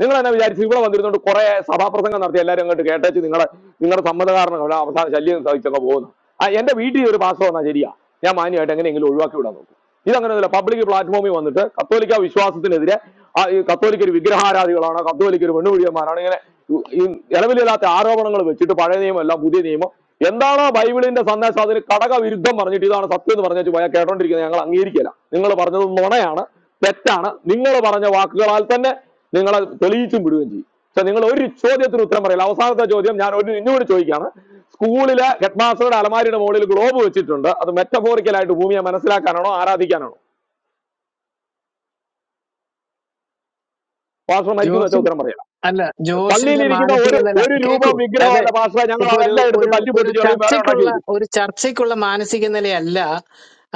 Speaker 4: നിങ്ങൾ തന്നെ വിചാരിച്ചു ഇവിടെ വന്നിരുന്നോണ്ട് കുറെ സഭാപ്രസംഗം നടത്തി എല്ലാവരും അങ്ങോട്ട് കേട്ടേച്ച് നിങ്ങളെ നിങ്ങളുടെ സമ്മത കാരണം അവിടെ അവസാന ശല്യം സാധിച്ചൊക്കെ പോകുന്നു ആ എന്റെ വീട്ടിൽ ഒരു പാസ്റ്റർ വന്നാൽ ശരിയാ ഞാൻ മാന്യമായിട്ട് എങ്ങനെയെങ്കിലും ഒഴിവാക്കി വിടാൻ നോക്കും ഇതങ്ങനെയല്ല പബ്ലിക് പ്ലാറ്റ്ഫോമിൽ വന്നിട്ട് കത്തോലിക്ക വിശ്വാസത്തിനെതിരെ ആ ഈ കത്തോലിക്കർ വിഗ്രഹാരാധികളാണ് കത്തോലിക്കർ പെണ്ണുപിടിയന്മാരാണ് ഇങ്ങനെ ഉ- ഈ ഇളവിലില്ലാത്ത ആരോപണങ്ങൾ വെച്ചിട്ട് പഴയ നിയമം എല്ലാം പുതിയ നിയമം എന്താണോ ബൈബിളിന്റെ സന്ദേശം അതിന് കടക വിരുദ്ധം പറഞ്ഞിട്ട് ഇതാണ് സത്യം എന്ന് പറഞ്ഞു പോയാൽ കേട്ടോണ്ടിരിക്കുന്നത് ഞങ്ങൾ അംഗീകരിക്കില്ല നിങ്ങൾ പറഞ്ഞത് നുണയാണ് തെറ്റാണ് നിങ്ങൾ പറഞ്ഞ വാക്കുകളാൽ തന്നെ നിങ്ങളെ തെളിയിച്ചും വിടുകയും ചെയ്യും പക്ഷെ നിങ്ങൾ ഒരു ചോദ്യത്തിന് ഉത്തരം പറയില്ല അവസാനത്തെ ചോദ്യം ഞാൻ ഒരു ഇന്നുകൂടി ചോദിക്കുകയാണ് സ്കൂളിലെ ഹെഡ് മാസ്റ്ററുടെ അലമാരിയുടെ മുകളിൽ ഗ്ലോബ് വെച്ചിട്ടുണ്ട് അത് metaphorical ആയിട്ട് ഭൂമിയെ മനസ്സിലാക്കാനാണോ ആരാധിക്കാനാണോ പാസ്റ്റർ മരിക്കുന്നു വെച്ചാൽ
Speaker 6: യു
Speaker 4: ഉത്തരം പറയാം
Speaker 6: അല്ല
Speaker 4: പള്ളിയിൽ
Speaker 6: ജോഷിന്റെ
Speaker 4: ഇരിക്കുന്ന
Speaker 6: മാനസിക
Speaker 4: ഒരു
Speaker 6: നില
Speaker 4: ഒരു രൂപം
Speaker 6: കേക്കൂ
Speaker 4: വിഗ്രഹം
Speaker 6: അതെ
Speaker 4: അല്ല പാസ്റ്റർ ഞങ്ങൾ
Speaker 6: ഇപ്പൊ ഒരു
Speaker 4: അതെല്ലാം എടുത്ത്
Speaker 6: ഒരു
Speaker 4: തല്ലി
Speaker 6: ഒരു
Speaker 4: പൊട്ടിച്ച് കളയും വേറെ ഉണ്ടാക്കി
Speaker 6: ചർച്ചയ്ക്കുള്ള
Speaker 4: വെക്കും
Speaker 6: ഒരു ചർച്ചയ്ക്കുള്ള മാനസിക നിലയല്ല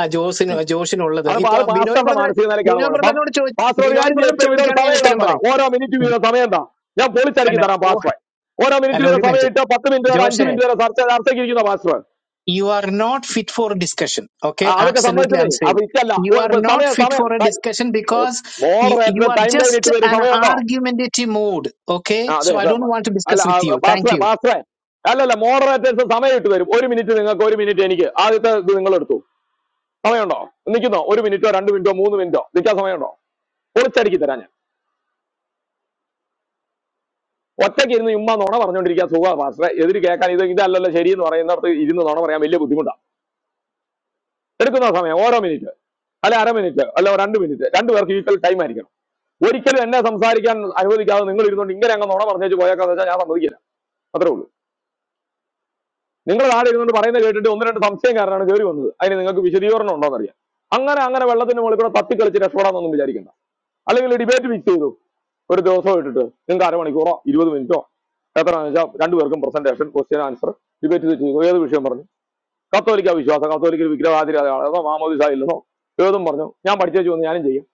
Speaker 6: ആ ജോസിന് ജോഷിനുള്ളത്
Speaker 4: അത് പാ-
Speaker 6: ഇപ്പൊ
Speaker 4: അത്
Speaker 6: ബിനോയ്
Speaker 4: പാസ്റ്ററുടെ
Speaker 6: ബ്രദർ
Speaker 4: മാനസിക നിലയ്ക്കാണ്
Speaker 6: ബിനോയ്
Speaker 4: കുഴപ്പം
Speaker 6: ബ്രദറിനോട് ചോ
Speaker 4: പാസ്റ്റർ ഒരു
Speaker 6: ബിനോയ്
Speaker 4: കാര്യം ചെയ്യും
Speaker 6: ബ്രദർ
Speaker 4: ഇപ്പൊ ഇവരോട്
Speaker 6: ചോദിക്കുകയാണെങ്കിൽ ഞാൻ
Speaker 4: സമയം ഇടാൻ
Speaker 6: ഉത്തരം
Speaker 4: പറ
Speaker 6: പറയും
Speaker 4: ഓരോ മിനിറ്റ് വീതം സമയം എന്താ ഞാൻ പൊളിച്ചടുക്കി
Speaker 6: അല്ല
Speaker 4: തരാം
Speaker 6: ഓ
Speaker 4: പാസ്റ്റർ ഓരോ മിനിറ്റ്
Speaker 6: അല്ല
Speaker 4: വീതം
Speaker 6: ഒരു
Speaker 4: സമയം
Speaker 6: മിനിറ്റ്
Speaker 4: ഇട്ട് പത്ത് മിനിറ്റ് വരെ അഞ്ച്
Speaker 6: ജോഷേ
Speaker 4: മിനിറ്റ് വരെ ചർച്ച ചർച്ചയ്ക്ക് ഇരിക്കുന്ന pastor
Speaker 6: you are not fit for discussion okay
Speaker 4: ആ, അതൊക്കെ
Speaker 6: ആബ്സല്യൂട്ട്ലി ഐ
Speaker 4: സമ്മതിച്ചതേ
Speaker 6: എം സേയിങ്
Speaker 4: അപ്പൊ ഇറ്റല്ല
Speaker 6: യു
Speaker 4: ഓ,
Speaker 6: ആർ
Speaker 4: ഇപ്പൊ
Speaker 6: നോട്ട്
Speaker 4: സമയം
Speaker 6: ഫിറ്റ്
Speaker 4: സമയം
Speaker 6: for a discussion because you
Speaker 4: moderator
Speaker 6: are
Speaker 4: time line ഇട്ട്
Speaker 6: ജസ്റ്റ്
Speaker 4: വരും
Speaker 6: ആൻ
Speaker 4: സമയമുണ്ടോ
Speaker 6: ആർഗ്യുമെന്റേറ്റീവ് മൂഡ് ഓക്കെ
Speaker 4: ആ
Speaker 6: സോ
Speaker 4: അതെ
Speaker 6: I
Speaker 4: sir
Speaker 6: don't want to
Speaker 4: അല്ല
Speaker 6: ഡിസ്കസ് വിത്ത് യു താങ്ക്
Speaker 4: പാസ്റ്ററെ
Speaker 6: യു
Speaker 4: പാസ്റ്ററെ അല്ലല്ല മോഡറേറ്റേഴ്സ് സമയം ഇട്ട് വരും ഒരു മിനിറ്റ് നിങ്ങൾക്ക് ഒരു മിനിറ്റ് എനിക്ക് ആദ്യത്തെ ഇത് നിങ്ങൾ എടുത്തു സമയമുണ്ടോ നിൽക്കുന്നോ ഒരു മിനിറ്റോ രണ്ട് മിനിറ്റോ മൂന്ന് മിനിറ്റോ നിൽക്കാൻ സമയമുണ്ടോ പൊളിച്ചടുക്കി തരാം ഞാൻ ഒറ്റയ്ക്ക് ഇരുന്ന് ഉമ്മ നോണ പറഞ്ഞുകൊണ്ടിരിക്കാൻ സുഖ പാസ്റ്ററെ എതിര് കേൾക്കാൻ ഇത് ഇതല്ലല്ലോ ശരി എന്ന് പറയുന്നിടത്ത് ഇരുന്ന് നോണ പറയാൻ വലിയ ബുദ്ധിമുട്ടാണ് എടുക്കുന്ന സമയം ഓരോ മിനിറ്റ് അല്ലെ അര മിനിറ്റ് അല്ല രണ്ട് മിനിറ്റ് രണ്ടു പേർക്ക് ഈക്വൽ ടൈം ആയിരിക്കണം ഒരിക്കലും എന്നെ സംസാരിക്കാൻ അനുവദിക്കാതെ നിങ്ങൾ ഇരുന്നുകൊണ്ട് ഇങ്ങനെ അങ്ങ് നുണ പറഞ്ഞേച്ച് പോയേക്കാന്ന് വെച്ചാൽ ഞാൻ സമ്മതിക്കില്ല അത്രേ ഉള്ളൂ നിങ്ങൾ ആടെ ഇരുന്നുകൊണ്ട് പറയുന്നത് കേട്ടിട്ട് ഒന്ന് രണ്ട് സംശയക്കാരനാണ് കയറി വന്നത് അതിന് നിങ്ങൾക്ക് വിശദീകരണം ഉണ്ടോ അറിയാം അങ്ങനെ അങ്ങനെ വെള്ളത്തിന് മുകളിൽ കൂടെ തത്തിക്കളിച്ച് രക്ഷപ്പെടാമെന്നൊന്നും വിചാരിക്കണ്ട അല്ലെങ്കിൽ ഡിബേറ്റ് ഫിക്സ് ചെയ്തു ഒരു ദിവസം ഇട്ടിട്ട് നിങ്ങൾക്ക് അരമണിക്കൂറോ ഇരുപത് മിനിറ്റോ എത്രയാണെന്ന് വെച്ചാൽ രണ്ടുപേർക്കും പ്രസന്റേഷൻ ക്വസ്റ്റ്യൻ ആൻസർ ഡിബേറ്റ് ചെയ്തു ഏത് വിഷയം പറഞ്ഞു കത്തോലിക്ക വിശ്വാസം കത്തോലിക്കൽ വിഗ്രഹാതിരാണോ മാമോദിസ ഇല്ലെന്നോ ഏതും പറഞ്ഞു ഞാൻ പഠിച്ചു വന്ന് ഞാനും ചെയ്യും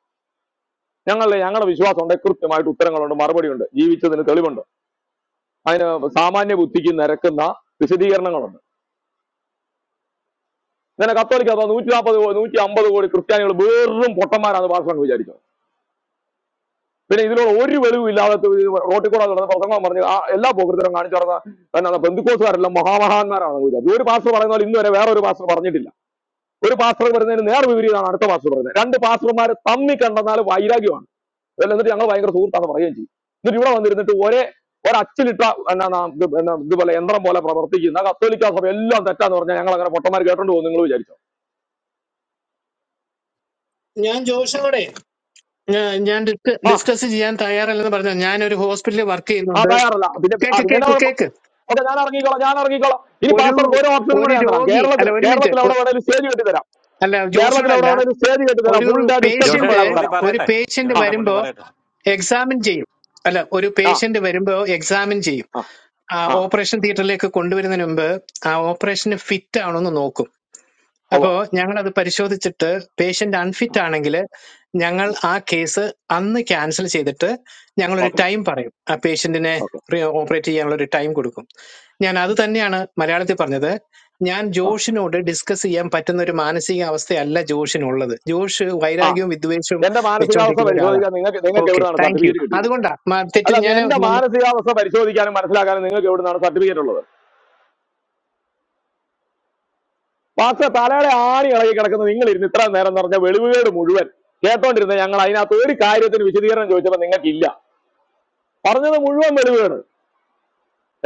Speaker 4: ഞങ്ങളുടെ ഞങ്ങളുടെ വിശ്വാസമുണ്ട് കൃത്യമായിട്ട് ഉത്തരങ്ങളുണ്ട് മറുപടിയുണ്ട് ജീവിച്ചതിന് തെളിവുണ്ട് അതിന് സാമാന്യ ബുദ്ധിക്ക് നിരക്കുന്ന വിശദീകരണങ്ങളുണ്ട് ഇങ്ങനെ കത്തോലിക്ക സഭ നൂറ്റി നാൽപ്പത് നൂറ്റി അമ്പത് കോടി ക്രിസ്ത്യാനികൾ വെറും പൊട്ടന്മാരാണ് പാർസങ്ങൾ വിചാരിച്ചത് പിന്നെ ഇതിലൂടെ ഒരു വെളിവും ഇല്ലാതെ റോട്ടിൽ കൂടെ നടന്ന് പ്രസംഗം പറഞ്ഞ് ആ എല്ലാ പോകൃതരും കാണിച്ചു നടന്ന എന്നാണ് ബന്ധുക്കോസുകാരെല്ലാം മഹാമഹാന്മാരാണെന്ന് വിചാരിച്ചു ഒരു പാസ്റ്റർ പറയുന്ന പോലെ ഇന്നുവരെ വേറെ ഒരു പാസ്റ്റർ പറഞ്ഞിട്ടില്ല ഒരു പാസ്റ്റർ പറയുന്നതിന് നേർ വിപരീതമാണ് അടുത്ത പാസ്റ്റർ പറയുന്നത് രണ്ട് പാസ്റ്റർമാരെ തമ്മി കണ്ടെന്നാൽ വൈരാഗ്യമാണ് ഇതെല്ലാം എന്നിട്ട് ഞങ്ങൾ ഭയങ്കര സുഹൃത്താന്ന് പറയുകയും ചെയ്യും എന്നിട്ട് ഇവിടെ വന്നിരുന്നിട്ട് ഒരേ ഒരച്ചിലിട്ട എന്നാ നാം ഇത് എന്നാ ഇതുപോലെ യന്ത്രം പോലെ പ്രവർത്തിക്കുന്ന കത്തോലിക്ക സഭ എല്ലാം തെറ്റാന്ന് പറഞ്ഞാൽ ഞങ്ങൾ അങ്ങനെ പൊട്ടന്മാർ കേട്ടോണ്ട് പോകും നിങ്ങൾ വിചാരിച്ചോ
Speaker 6: ഞാൻ ജോഷിനോടെ ഞാ- ഞാൻ ഡിസ്ക-
Speaker 4: ആ
Speaker 6: ഡിസ്കസ് ചെയ്യാൻ തയ്യാറല്ലെന്ന് പറഞ്ഞ ഞാൻ ഒരു ഹോസ്പിറ്റലിൽ വർക്ക്
Speaker 4: ആ
Speaker 6: ചെയ്യുന്നുണ്ട്
Speaker 4: തയ്യാറല്ല പിന്നെ ആ
Speaker 6: കേക്ക്
Speaker 4: പിന്നെ എന്നാ
Speaker 6: കേക്ക്
Speaker 4: കുഴപ്പം
Speaker 6: കേക്ക്
Speaker 4: ഓക്കെ ഞാൻ ഇറങ്ങിക്കോളാം ഞാൻ ഇറങ്ങിക്കോളാം ഇനി
Speaker 6: ഒരു
Speaker 4: പാസ്സർക്ക് ഓരോ ഓപ്ഷനും
Speaker 6: ഒരു
Speaker 4: കൂടെ ഞാൻ തരാം
Speaker 6: രോഗി അല്ല
Speaker 4: കേരളത്തിൽ
Speaker 6: ഒരു മിനിറ്റ്
Speaker 4: കേരളത്തിൽ എവിടെ
Speaker 6: ഒ-
Speaker 4: വേണേലും സ്റ്റേജ് കെട്ടി തരാം
Speaker 6: അല്ല
Speaker 4: കേരളത്തിൽ എവിടെ
Speaker 6: ജോഷോടല്ല
Speaker 4: വേണേലും സ്റ്റേജ് കെട്ടി തരാം
Speaker 6: ഒരു
Speaker 4: ഫുൾ ഡേ ഡിസ്കഷനും
Speaker 6: പേഷ്യന്റ്
Speaker 7: ജോഷേട്ടാ
Speaker 4: വേണമെങ്കിൽ
Speaker 7: പുള്ളി
Speaker 4: തരാം
Speaker 6: ഒരു
Speaker 7: പറയട്ടെ
Speaker 6: പേഷ്യന്റ്
Speaker 4: ആ
Speaker 7: ജോഷേട്ടാ പുള്ളി
Speaker 6: വരുമ്പോ
Speaker 7: പറയട്ടെ
Speaker 6: എക്സാമിൻ ചെയ്യും അല്ല ഒരു
Speaker 4: ആ
Speaker 6: പേഷ്യന്റ് വരുമ്പോ എക്സാമിൻ ചെയ്യും
Speaker 4: ആ
Speaker 6: ആ
Speaker 4: ആ
Speaker 6: ഓപ്പറേഷൻ തിയേറ്ററിലേക്ക് കൊണ്ടുവരുന്നതിന് മുമ്പ് ആ ഓപ്പറേഷന് ഫിറ്റ് ആണോന്ന് നോക്കും
Speaker 4: ഓ
Speaker 6: അപ്പോ ഞങ്ങൾ അത് പരിശോധിച്ചിട്ട് പേഷ്യന്റ് അൺഫിറ്റ് ആണെങ്കിൽ ഞങ്ങൾ ആ കേസ് അന്ന് ക്യാൻസൽ ചെയ്തിട്ട് ഞങ്ങൾ ഒരു
Speaker 4: ഓക്കെ
Speaker 6: ടൈം പറയും ആ പേഷ്യന്റിനെ
Speaker 4: ഓക്കെ
Speaker 6: ഓപ്പറേറ്റ് ചെയ്യാനുള്ള ഒരു ടൈം കൊടുക്കും ഞാൻ അത് തന്നെയാണ് മലയാളത്തിൽ പറഞ്ഞത് ഞാൻ
Speaker 4: ആ
Speaker 6: ജോഷിനോട് ഡിസ്കസ് ചെയ്യാൻ പറ്റുന്ന ഒരു മാനസിക അവസ്ഥയല്ല ജോഷിനുള്ളത് ജോഷ്
Speaker 4: ആ
Speaker 6: വൈരാഗ്യവും വിദ്വേഷവും
Speaker 4: എന്റെ മാനസികാവസ്ഥ
Speaker 6: വെച്ചുകൊണ്ടിരിക്കുന്ന ഒരാളാണ്
Speaker 4: പരിശോധിക്കാൻ നിങ്ങൾക്ക് നിങ്ങൾക്ക്
Speaker 6: ഓക്കെ
Speaker 4: എവിടെയാണ്
Speaker 6: താങ്ക് യു
Speaker 4: സർട്ടിഫിക്കറ്റ് കിട്ടിയത്
Speaker 6: അതുകൊണ്ടാ മ- തെറ്റ്
Speaker 4: അല്ല നീ
Speaker 6: ഞാൻ
Speaker 4: എന്റെ മാനസികാവസ്ഥ പരിശോധിക്കാനും മനസ്സിലാക്കാനും നിങ്ങൾക്ക് എവിടുന്നാണ് സർട്ടിഫിക്കറ്റ് ഉള്ളത് പാസ്റ്റർ തലയുടെ ആണി ഇളകി കിടക്കുന്ന നിങ്ങൾ ഇരുന്ന് ഇത്ര നേരം എന്ന് പറഞ്ഞ വെളിവുകേട് മുഴുവൻ കേട്ടോണ്ടിരുന്ന ഞങ്ങൾ അതിനകത്ത് ഒരു കാര്യത്തിന് വിശദീകരണം ചോദിച്ചപ്പോൾ നിങ്ങൾക്കില്ല പറഞ്ഞത് മുഴുവൻ വെളിവുകേട്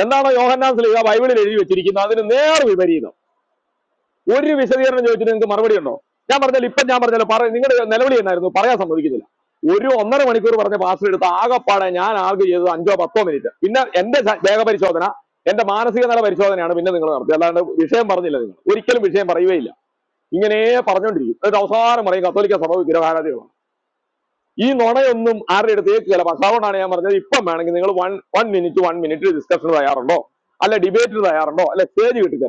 Speaker 4: എന്താണോ യോഹന്നാൻ സ്ലീഹ ബൈബിളിൽ എഴുതി വെച്ചിരിക്കുന്നത് അതിന് നേർ വിപരീതം ഒരു വിശദീകരണം ചോദിച്ചിട്ട് നിങ്ങൾക്ക് മറുപടി ഉണ്ടോ ഞാൻ പറഞ്ഞാൽ ഇപ്പം ഞാൻ പറഞ്ഞല്ലോ പറ നിങ്ങളുടെ നിലവിളി എന്നായിരുന്നു പറയാൻ സമ്മതിക്കുന്നില്ല ഒരു ഒന്നര മണിക്കൂർ പറഞ്ഞ പാസ് എടുത്ത് ആകെപ്പാടെ ഞാൻ ആകെ ചെയ്തത് അഞ്ചോ പത്തോ മിനിറ്റ് പിന്നെ എന്റെ ശ- ദേഹപരിശോധന എന്റെ മാനസിക നില പരിശോധനയാണ് പിന്നെ നിങ്ങൾ നടത്തിയത് അല്ലാണ്ട് വിഷയം പറഞ്ഞില്ല നിങ്ങൾ ഒരിക്കലും വിഷയം പറയുകയില്ല ഇങ്ങനെ പറഞ്ഞുകൊണ്ടിരിക്കും എന്നിട്ട് അവസാനം പറയും കത്തോലിക്ക സഭ വിഗ്രഹാരാധികളാണ് ഈ നുണയൊന്നും ആരുടെ അടുത്ത് കേൾക്കില്ല അതുകൊണ്ടാണ് ഞാൻ പറഞ്ഞത് ഇപ്പം വേണമെങ്കിൽ നിങ്ങൾ one one minute one minute ഡിസ്കഷന് തയ്യാറുണ്ടോ അല്ല ഡിബേറ്റിന് തയ്യാറുണ്ടോ അല്ല സ്റ്റേജ് കിട്ടിത്തരാം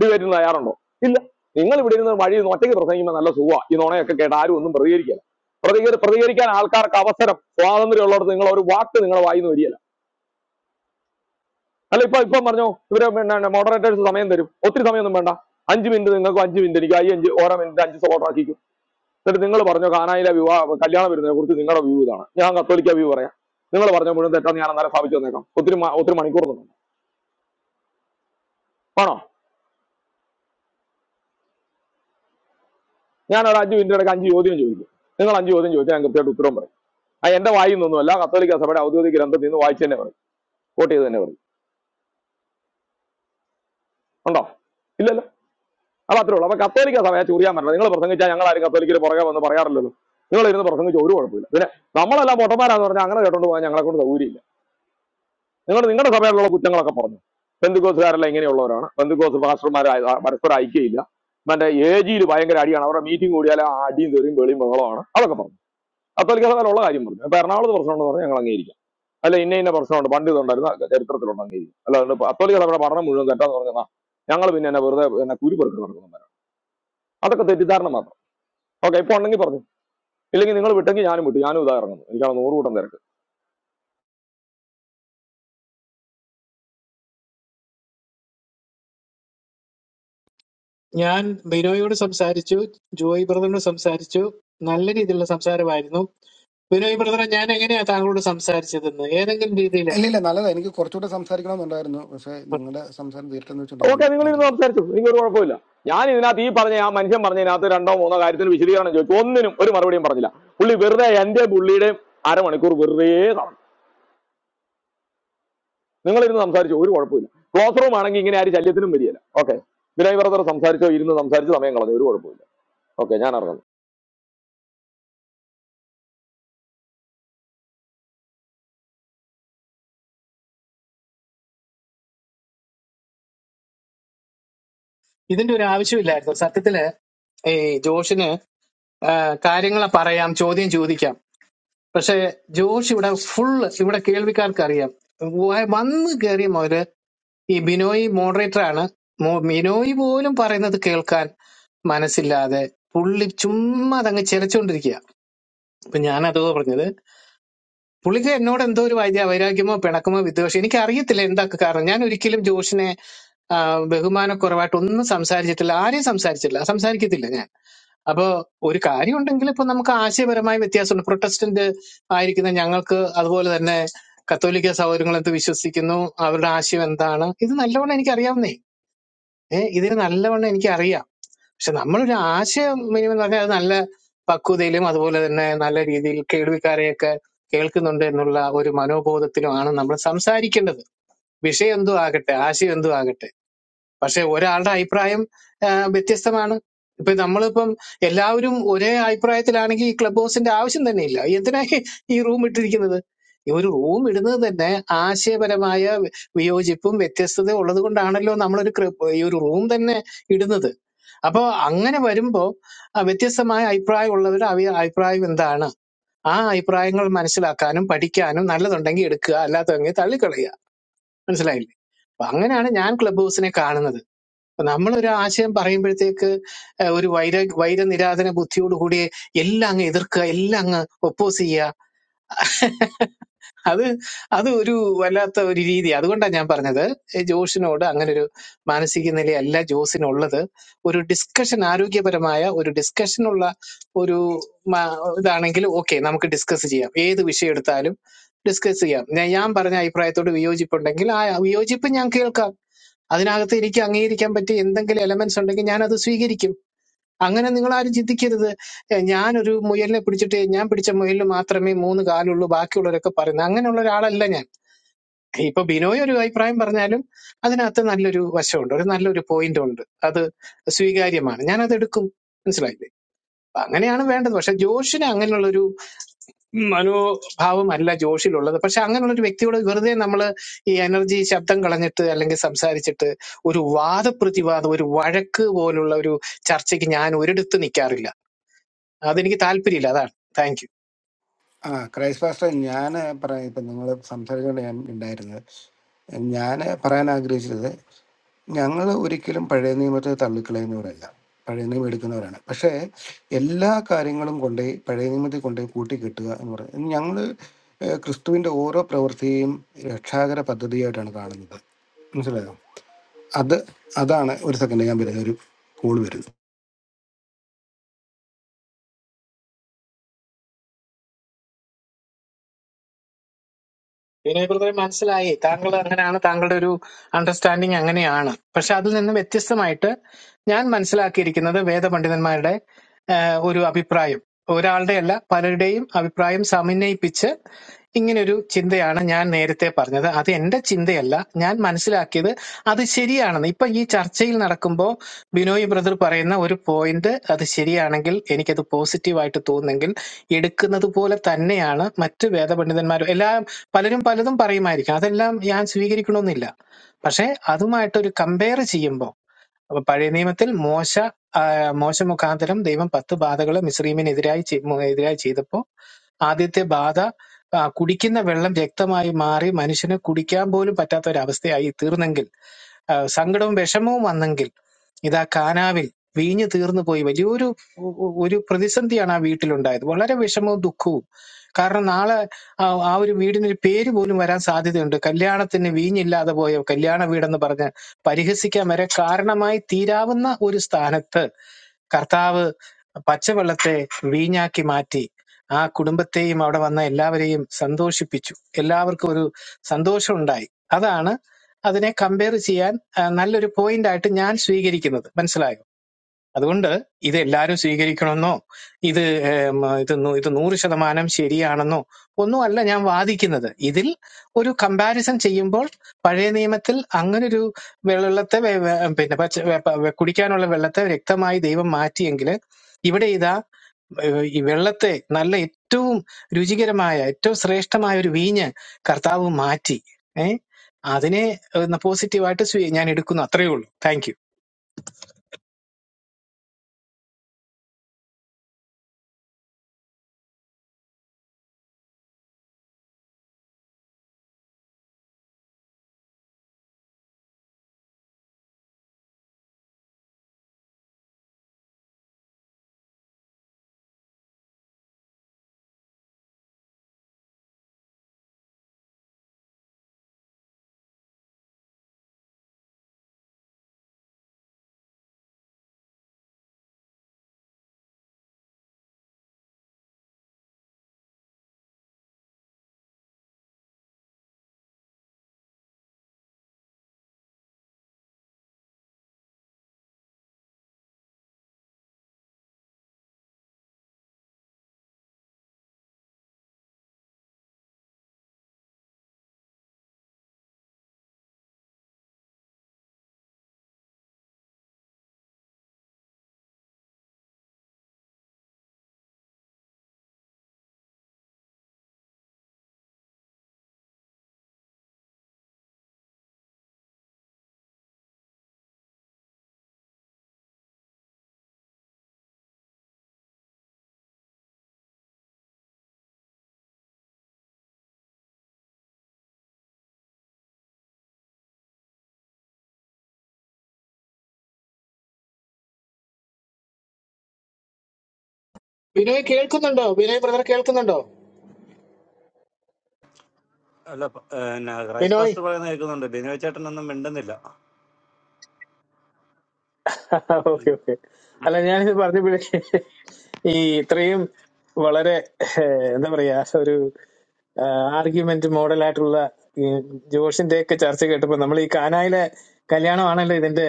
Speaker 4: ഡിബേറ്റിന് തയ്യാറുണ്ടോ ഇല്ല നിങ്ങൾ ഇവിടെ ഇരുന്ന് വഴി ഇരുന്ന് ഒറ്റയ്ക്ക് പ്രസംഗിക്കുമ്പോൾ നല്ല സുഖമാണ് ഈ നുണയൊക്കെ കേട്ട് ആരും ഒന്നും പ്രതികരിക്കില്ല പ്രതികരി പ്രതികരിക്കാൻ ആൾക്കാർക്ക് അവസരം സ്വാതന്ത്ര്യം ഉള്ളിടത്ത് നിങ്ങൾ ഒരു വാക്ക് നിങ്ങൾ വായിന്ന് വരികയില്ല അല്ല ഇപ്പൊ ഇപ്പം പറഞ്ഞോ ഇവര് പിന്നെ മോഡറേറ്റേഴ്സ് സമയം തരും ഒത്തിരി സമയമൊന്നും വേണ്ട അഞ്ച് മിനിറ്റ് നിങ്ങൾക്ക് അഞ്ച് മിനിറ്റ് എനിക്ക് ഈ അഞ്ച് ഓരോ മിനിറ്റ് അഞ്ച് സ്ലോട്ട് ആക്കിക്കും എന്നിട്ട് നിങ്ങൾ പറഞ്ഞോ കാനായിലെ വിവാഹ കല്യാണം വരുന്നതിനെ കുറിച്ച് നിങ്ങളുടെ വ്യൂ ഇതാണ് ഞാൻ കത്തോലിക്ക വ്യൂ പറയാം നിങ്ങൾ പറഞ്ഞ മുഴുവൻ തെറ്റാന്ന് ഞാൻ അന്നേരം സ്ഥാപിച്ചു വന്നേക്കാം ഒത്തിരി മ- ഒത്തിരി മണിക്കൂർ നിന്നു ആണോ ഞാൻ ഒരു അഞ്ച് മിനിറ്റ് ഇടയ്ക്ക് അഞ്ച് ചോദ്യം ചോദിക്കും നിങ്ങൾ അഞ്ച് ചോദ്യം ചോദിച്ചാൽ ഞാൻ കൃത്യമായിട്ട് ഉത്തരം പറയും ആ എന്റെ വായിൽ നിന്നൊന്നുമല്ല കത്തോലിക്ക സഭയുടെ ഔദ്യോഗിക ഗ്രന്ഥത്തിൽ നിന്ന് വായിച്ചു തന്നെ പറയും കോട്ട് ചെയ്ത് തന്നെ പറയും ഉണ്ടോ ഇല്ലല്ലോ അപ്പൊ അത്രേ ഉള്ളൂ അപ്പൊ കത്തോലിക്ക സഭയെ ചുറിയാൻ പറ്റില്ല നിങ്ങൾ പ്രസംഗിച്ചാൽ ഞങ്ങൾ ആരും കത്തോലിക്കര് പുറകെ വന്ന് പറയാറില്ലല്ലോ നിങ്ങൾ ഇരുന്ന് പ്രസംഗിച്ച ഒരു കുഴപ്പമില്ല പിന്നെ നമ്മളെല്ലാം പൊട്ടന്മാരാന്ന് പറഞ്ഞാൽ അങ്ങനെ കേട്ടോണ്ട് പോകാൻ ഞങ്ങളെ കൊണ്ട് സൗകര്യമില്ല നിങ്ങൾ നിങ്ങളുടെ സഭയിലുള്ള കുറ്റങ്ങളൊക്കെ പറഞ്ഞു ബന്ധുക്കോസുകാരെല്ലാം ഇങ്ങനെയുള്ളവരാണ് ബന്ധുക്കോസ് പാസ്റ്റർമാർ പരസ്പരം ഐക്യയില്ല മറ്റേ ഏജിയിൽ ഭയങ്കര അടിയാണ് അവരുടെ മീറ്റിംഗ് കൂടിയാൽ ആ അടിയും തെറിയും വെളിയും ബഹളമാണ് അതൊക്കെ പറഞ്ഞു കത്തോലിക്ക സഭയിലുള്ള കാര്യം പറഞ്ഞു അപ്പൊ എറണാകുളത്ത് പ്രശ്നമുണ്ടെന്ന് പറഞ്ഞാൽ ഞങ്ങൾ അങ്ങേരി അല്ല ഇന്ന ഇന്ന പ്രശ്നമുണ്ട് പണ്ട് ഇതുണ്ടായിരുന്ന ചരിത്രത്തിലുണ്ടെങ്കിൽ അല്ലാണ്ട് അത്തോലിക സഭയുടെ പഠനം മുഴുവൻ തെറ്റാന്ന് പറഞ്ഞാൽ ഞങ്ങൾ പിന്നെ എന്നെ വെറുതെ എന്നെ കുരുപെറുക്കി നടക്കുന്നു അതൊക്കെ തെറ്റിദ്ധാരണ മാത്രം ഓക്കെ ഇപ്പൊ ഉണ്ടെങ്കിൽ പറഞ്ഞു ഇല്ലെങ്കിൽ നിങ്ങൾ വിട്ടെങ്കിൽ ഞാനും വിട്ടു ഞാനും ഇതായിരുന്നു എനിക്കാണ് നൂറ് കൂട്ടം തിരക്ക്
Speaker 6: ഞാൻ ബിനോയോട് സംസാരിച്ചു ജോയ് ബ്രദറിനോട് സംസാരിച്ചു നല്ല രീതിയിലുള്ള സംസാരമായിരുന്നു വിനോയ് ബ്രദറെ ഞാൻ എങ്ങനെയാ താങ്കളോട് സംസാരിച്ചതെന്ന് ഏതെങ്കിലും രീതിയിൽ
Speaker 1: ഇല്ല ഇല്ല നല്ലതാ എനിക്ക് കുറച്ചുകൂടെ സംസാരിക്കണമെന്നുണ്ടായിരുന്നു പക്ഷെ നിങ്ങളുടെ സംസാരം തീർത്തെന്ന് വെച്ചോണ്ട് ഞാൻ
Speaker 4: ഓക്കെ നിങ്ങൾ ഇരുന്ന്
Speaker 1: മാറിക്കുന്നു
Speaker 4: സംസാരിച്ചു എനിക്ക് ഒരു കുഴപ്പമില്ല ഞാൻ ഇതിനകത്ത് ഈ പറഞ്ഞ ആ മനുഷ്യൻ പറഞ്ഞതിനകത്ത് രണ്ടോ മൂന്നോ കാര്യത്തിന് വിശദീകരണം ചോദിച്ചു ഒന്നിനും ഒരു മറുപടിയും പറഞ്ഞില്ല പുള്ളി വെറുതെ എന്റെ പുള്ളിയുടെയും അരമണിക്കൂർ വെറുതെ നടന്നു നിങ്ങൾ ഇരുന്ന് സംസാരിച്ചു ഒരു കുഴപ്പമില്ല ക്ലോസ് റൂം ആണെങ്കിൽ ഇങ്ങനെ ആരും ശല്യത്തിനും വരികയില്ല ഓക്കെ വിനയ് ബ്രദർ സംസാരിച്ചോ ഇരുന്ന് സംസാരിച്ച് സമയം കളഞ്ഞു ഒരു കുഴപ്പമില്ല ഓക്കെ ഞാൻ ഇറങ്ങുന്നു
Speaker 6: ഇതിന്റെ ഒരു ആവശ്യമില്ലായിരുന്നു സത്യത്തില് ഈ ജോഷിന് ആ, കാര്യങ്ങൾ പറയാം ചോദ്യം ചോദിക്കാം പക്ഷെ ജോഷ് ഇവിടെ ഫുൾ ഇവിടെ കേൾവിക്കാർക്ക് അറിയാം വ- വന്ന് കയറിയ മുതല് ഈ ബിനോയ് മോഡറേറ്റർ ആണ് മോ- ബിനോയ് പോലും പറയുന്നത് കേൾക്കാൻ മനസ്സില്ലാതെ പുള്ളി ചുമ്മാ അതങ്ങ് ചിലച്ചുകൊണ്ടിരിക്കുക അപ്പൊ ഞാൻ അതോ പറഞ്ഞത് പുള്ളിക്ക് എന്നോട് എന്തോ ഒരു വൈദ്യ വൈരാഗ്യമോ പിണക്കമോ വിദ്വേഷം എനിക്ക് അറിയത്തില്ല എന്താ കാരണം ഞാൻ ഒരിക്കലും ജോഷിനെ ആ, ബഹുമാനക്കുറവായിട്ട് ഒന്നും സംസാരിച്ചിട്ടില്ല ആരെയും സംസാരിച്ചില്ല സംസാരിക്കത്തില്ല ഞാൻ അപ്പോ ഒരു കാര്യം ഉണ്ടെങ്കിൽ ഇപ്പൊ നമുക്ക് ആശയപരമായ വ്യത്യാസമുണ്ട് പ്രൊട്ടസ്റ്റന്റ് ആയിരിക്കുന്ന ഞങ്ങൾക്ക് അതുപോലെ തന്നെ കത്തോലിക്ക സൗകര്യങ്ങൾ എന്ത് വിശ്വസിക്കുന്നു അവരുടെ ആശയം എന്താണ് ഇത് നല്ലവണ്ണം എനിക്ക് അറിയാവുന്നേ ഏഹ് ഇതിന് നല്ലവണ്ണം എനിക്ക് അറിയാം പക്ഷെ നമ്മളൊരു ആശയം മിനിമം പറഞ്ഞാൽ അത് നല്ല പക്വതയിലും അതുപോലെ തന്നെ നല്ല രീതിയിൽ കേൾവിക്കാരെയൊക്കെ കേൾക്കുന്നുണ്ട് എന്നുള്ള ഒരു മനോബോധത്തിലുമാണ് നമ്മൾ സംസാരിക്കേണ്ടത് വിഷയം എന്തോ ആകട്ടെ ആശയം എന്തോ ആകട്ടെ പക്ഷെ ഒരാളുടെ അഭിപ്രായം ആ, വ്യത്യസ്തമാണ് ഇപ്പൊ നമ്മളിപ്പം എല്ലാവരും ഒരേ അഭിപ്രായത്തിലാണെങ്കിൽ ഈ ക്ലബ് ഹൗസിന്റെ ആവശ്യം തന്നെ ഇല്ല എന്തിനാ ഈ ഈ റൂം ഇട്ടിരിക്കുന്നത് ഈ ഒരു റൂം ഇടുന്നത് തന്നെ ആശയപരമായ വി- വിയോജിപ്പും വ്യത്യസ്തതയും ഉള്ളത് കൊണ്ടാണല്ലോ നമ്മളൊരു ക്ര- ഈ ഒരു റൂം തന്നെ ഇടുന്നത് അപ്പോൾ അങ്ങനെ വരുമ്പോൾ വ്യത്യസ്തമായ അഭിപ്രായമുള്ളവരുടെ അവി അഭിപ്രായം എന്താണ് ആ അഭിപ്രായങ്ങൾ മനസ്സിലാക്കാനും പഠിക്കാനും നല്ലതുണ്ടെങ്കിൽ എടുക്കുക അല്ലാത്തതെങ്കിൽ തള്ളിക്കളയുക മനസ്സിലായില്ലേ അപ്പൊ അങ്ങനെയാണ് ഞാൻ ക്ലബ് ഹൗസിനെ കാണുന്നത് അപ്പൊ നമ്മളൊരു ആശയം പറയുമ്പോഴത്തേക്ക് ഏഹ്, ഒരു വൈര വൈരനിരാധന ബുദ്ധിയോടുകൂടി എല്ലാം അങ്ങ് എതിർക്കുക എല്ലാം അങ്ങ് ഒപ്പോസ് ചെയ്യുക അത് അത് ഒരു വല്ലാത്ത ഒരു രീതി അതുകൊണ്ടാണ് ഞാൻ പറഞ്ഞത് ഏ, ജോഷിനോട് അങ്ങനെ ഒരു മാനസിക നിലയല്ല ജോസിനുള്ളത് ഒരു ഡിസ്കഷൻ ആരോഗ്യപരമായ ഒരു ഡിസ്കഷനുള്ള ഒരു മാ- ഇതാണെങ്കിൽ ഓക്കെ നമുക്ക് ഡിസ്കസ് ചെയ്യാം ഏത് വിഷയം എടുത്താലും ഡിസ്കസ് ചെയ്യാം ഞാൻ ഞാൻ പറഞ്ഞ അഭിപ്രായത്തോട് വിയോജിപ്പുണ്ടെങ്കിൽ ആ വിയോജിപ്പ് ഞാൻ കേൾക്കാം അതിനകത്ത് എനിക്ക് അംഗീകരിക്കാൻ പറ്റിയ എന്തെങ്കിലും എലമെന്റ്സ് ഉണ്ടെങ്കിൽ ഞാൻ അത് സ്വീകരിക്കും അങ്ങനെ നിങ്ങൾ ആരും ചിന്തിക്കരുത് ഏ, ഞാനൊരു മുയലിനെ പിടിച്ചിട്ട് ഞാൻ പിടിച്ച മുയലിന് മാത്രമേ മൂന്ന് കാലുള്ളൂ ബാക്കിയുള്ളവരൊക്കെ പറയുന്നത് അങ്ങനെയുള്ള ഒരാളല്ല ഞാൻ ഇപ്പൊ ബിനോയ് ഒരു അഭിപ്രായം പറഞ്ഞാലും അതിനകത്ത് നല്ലൊരു വശമുണ്ട് ഒരു നല്ലൊരു പോയിന്റ് ഉണ്ട് അത് സ്വീകാര്യമാണ് ഞാൻ അത് എടുക്കും മനസ്സിലായില്ലേ അപ്പൊ അങ്ങനെയാണ് വേണ്ടത് പക്ഷെ ജോഷിന് അങ്ങനെയുള്ളൊരു മനോഭാവം അല്ല ജോഷിലുള്ളത് പക്ഷെ അങ്ങനെയുള്ള ഒരു വ്യക്തിയോട് വെറുതെ നമ്മൾ ഈ എനർജി ശബ്ദം കളഞ്ഞിട്ട് അല്ലെങ്കിൽ സംസാരിച്ചിട്ട് ഒരു വാദപ്രതിവാദം ഒരു വഴക്ക് പോലുള്ള ഒരു ചർച്ചയ്ക്ക് ഞാൻ ഒരിടത്ത് നിൽക്കാറില്ല അതെനിക്ക് താല്പര്യമില്ല അതാണ് താങ്ക് യു
Speaker 1: ആ ക്രൈസ്റ്റ് പാസ്റ്റർ ഞാൻ പറയാം ഇപ്പം നിങ്ങൾ സംസാരിച്ചുകൊണ്ട് ഞാൻ ഉണ്ടായിരുന്നത് ഞാൻ പറയാൻ ആഗ്രഹിച്ചത് ഞങ്ങൾ ഒരിക്കലും പഴയ നിയമത്തെ തള്ളിക്കളയുന്നവരല്ല പഴയ നിയമം എടുക്കുന്നവരാണ് പക്ഷേ എല്ലാ കാര്യങ്ങളും കൊണ്ടുപോയി പഴയ നിയമത്തിൽ കൊണ്ടുപോയി കൂട്ടിക്കെട്ടുക എന്ന് പറയുന്നത് ഞങ്ങൾ ക്രിസ്തുവിൻ്റെ ഓരോ പ്രവൃത്തിയും രക്ഷാകര പദ്ധതിയായിട്ടാണ് കാണുന്നത് മനസ്സിലായോ അത് അതാണ് ഒരു സെക്കൻഡ് ഞാൻ വരുന്നത് ഒരു കോൾ വരുന്നു
Speaker 6: വിനയ് ബ്രദറെ മനസ്സിലായി താങ്കൾ അങ്ങനെയാണ് താങ്കളുടെ ഒരു അണ്ടർസ്റ്റാൻഡിങ് അങ്ങനെയാണ് പക്ഷെ അതിൽ നിന്ന് വ്യത്യസ്തമായിട്ട് ഞാൻ മനസ്സിലാക്കിയിരിക്കുന്നത് വേദപണ്ഡിതന്മാരുടെ ആഹ് ഒരു അഭിപ്രായം ഒരാളുടെ അല്ല പലരുടെയും അഭിപ്രായം സമന്വയിപ്പിച്ച് ഇങ്ങനൊരു ചിന്തയാണ് ഞാൻ നേരത്തെ പറഞ്ഞത് അത് എന്റെ ചിന്തയല്ല ഞാൻ മനസ്സിലാക്കിയത് അത് ശരിയാണെന്ന് ഇപ്പൊ ഈ ചർച്ചയിൽ നടക്കുമ്പോൾ ബിനോയ് ബ്രദർ പറയുന്ന ഒരു പോയിന്റ് അത് ശരിയാണെങ്കിൽ എനിക്കത് പോസിറ്റീവായിട്ട് തോന്നുന്നെങ്കിൽ എടുക്കുന്നത് പോലെ തന്നെയാണ് മറ്റു വേദപണ്ഡിതന്മാരും എല്ലാം പലരും പലതും പറയുമായിരിക്കും അതെല്ലാം ഞാൻ സ്വീകരിക്കണമെന്നില്ല പക്ഷെ അതുമായിട്ട് ഒരു കമ്പയർ ചെയ്യുമ്പോൾ അപ്പൊ പഴയ നിയമത്തിൽ മോശ ആ, മോശ മുഖാന്തരം ദൈവം പത്ത് ബാധകൾ മിസ്രീമിനെതിരായി ചെ- മു- എതിരായി ചെയ്തപ്പോ ആദ്യത്തെ ബാധ ആ, കുടിക്കുന്ന വെള്ളം രക്തമായി മാറി മനുഷ്യന് കുടിക്കാൻ പോലും പറ്റാത്ത ഒരവസ്ഥയായി തീർന്നെങ്കിൽ ആ, സങ്കടവും വിഷമവും വന്നെങ്കിൽ ഇതാ കാനാവിൽ വീഞ്ഞു തീർന്നു പോയി വലിയൊരു ഒ- ഒ- ഒരു പ്രതിസന്ധിയാണ് ആ വീട്ടിലുണ്ടായത് വളരെ വിഷമവും ദുഃഖവും കാരണം നാളെ ആ ആ ഒരു വീടിനൊരു പേര് പോലും വരാൻ സാധ്യതയുണ്ട് കല്യാണത്തിന് വീഞ്ഞില്ലാതെ പോയ കല്യാണ വീടെന്ന് പറഞ്ഞ പരിഹസിക്കാൻ വരെ കാരണമായി തീരാവുന്ന ഒരു സ്ഥാനത്ത് കർത്താവ് പച്ചവെള്ളത്തെ വീഞ്ഞാക്കി മാറ്റി ആ കുടുംബത്തെയും അവിടെ വന്ന എല്ലാവരെയും സന്തോഷിപ്പിച്ചു എല്ലാവർക്കും ഒരു സന്തോഷം ഉണ്ടായി അതാണ് അതിനെ കമ്പയർ ചെയ്യാൻ ആ, നല്ലൊരു പോയിന്റ് ആയിട്ട് ഞാൻ സ്വീകരിക്കുന്നത് മനസ്സിലായോ അതുകൊണ്ട് ഇത് എല്ലാവരും സ്വീകരിക്കണമെന്നോ ഇത് ഏം, ഇത് നൂ- ഇത് നൂറ് ശതമാനം ശരിയാണെന്നോ ഒന്നുമല്ല ഞാൻ വാദിക്കുന്നത് ഇതിൽ ഒരു കമ്പാരിസൺ ചെയ്യുമ്പോൾ പഴയ നിയമത്തിൽ അങ്ങനൊരു വെള്ളത്തെ വെ- വെ- പിന്നെ പച്ച വെ- പ- വെ- കുടിക്കാനുള്ള വെള്ളത്തെ വ്യക്തമായി ദൈവം മാറ്റിയെങ്കിൽ ഇവിടെ ഇതാ ഏഹ്, ഈ വെള്ളത്തെ നല്ല ഏറ്റവും രുചികരമായ ഏറ്റവും ശ്രേഷ്ഠമായ ഒരു വീഞ്ഞ് കർത്താവ് മാറ്റി ഏ അതിനെ പോസിറ്റീവായിട്ട് ഞാൻ എടുക്കുന്നു അത്രയേ ഉള്ളൂ താങ്ക് യു വിനയ് കേൾക്കുന്നുണ്ടോ വിനയ് ബ്രദർ കേൾക്കുന്നുണ്ടോ
Speaker 7: അല്ല പ- ഏഹ്, പിന്നെ ക്രൈസ്റ്റ്
Speaker 6: ബിനോയ്
Speaker 7: പാസ്റ്റർ പറയുന്ന കേൾക്കുന്നുണ്ട് ബിനോയ് ചേട്ടനൊന്നും മിണ്ടുന്നില്ല
Speaker 6: ഓക്കെ
Speaker 7: ഉം.
Speaker 6: ഓക്കെ അല്ല ഞാനിത് പറഞ്ഞപ്പോഴേ ഈ ഇത്രയും വളരെ ഏഹ്, എന്താ പറയാ ഒരു ആർഗ്യുമെന്റ് മോഡലായിട്ടുള്ള ജോഷിന്റെ ഒക്കെ ചർച്ച കേട്ടപ്പോ നമ്മൾ ഈ കാനായിലെ കല്യാണമാണല്ലോ ഇതിന്റെ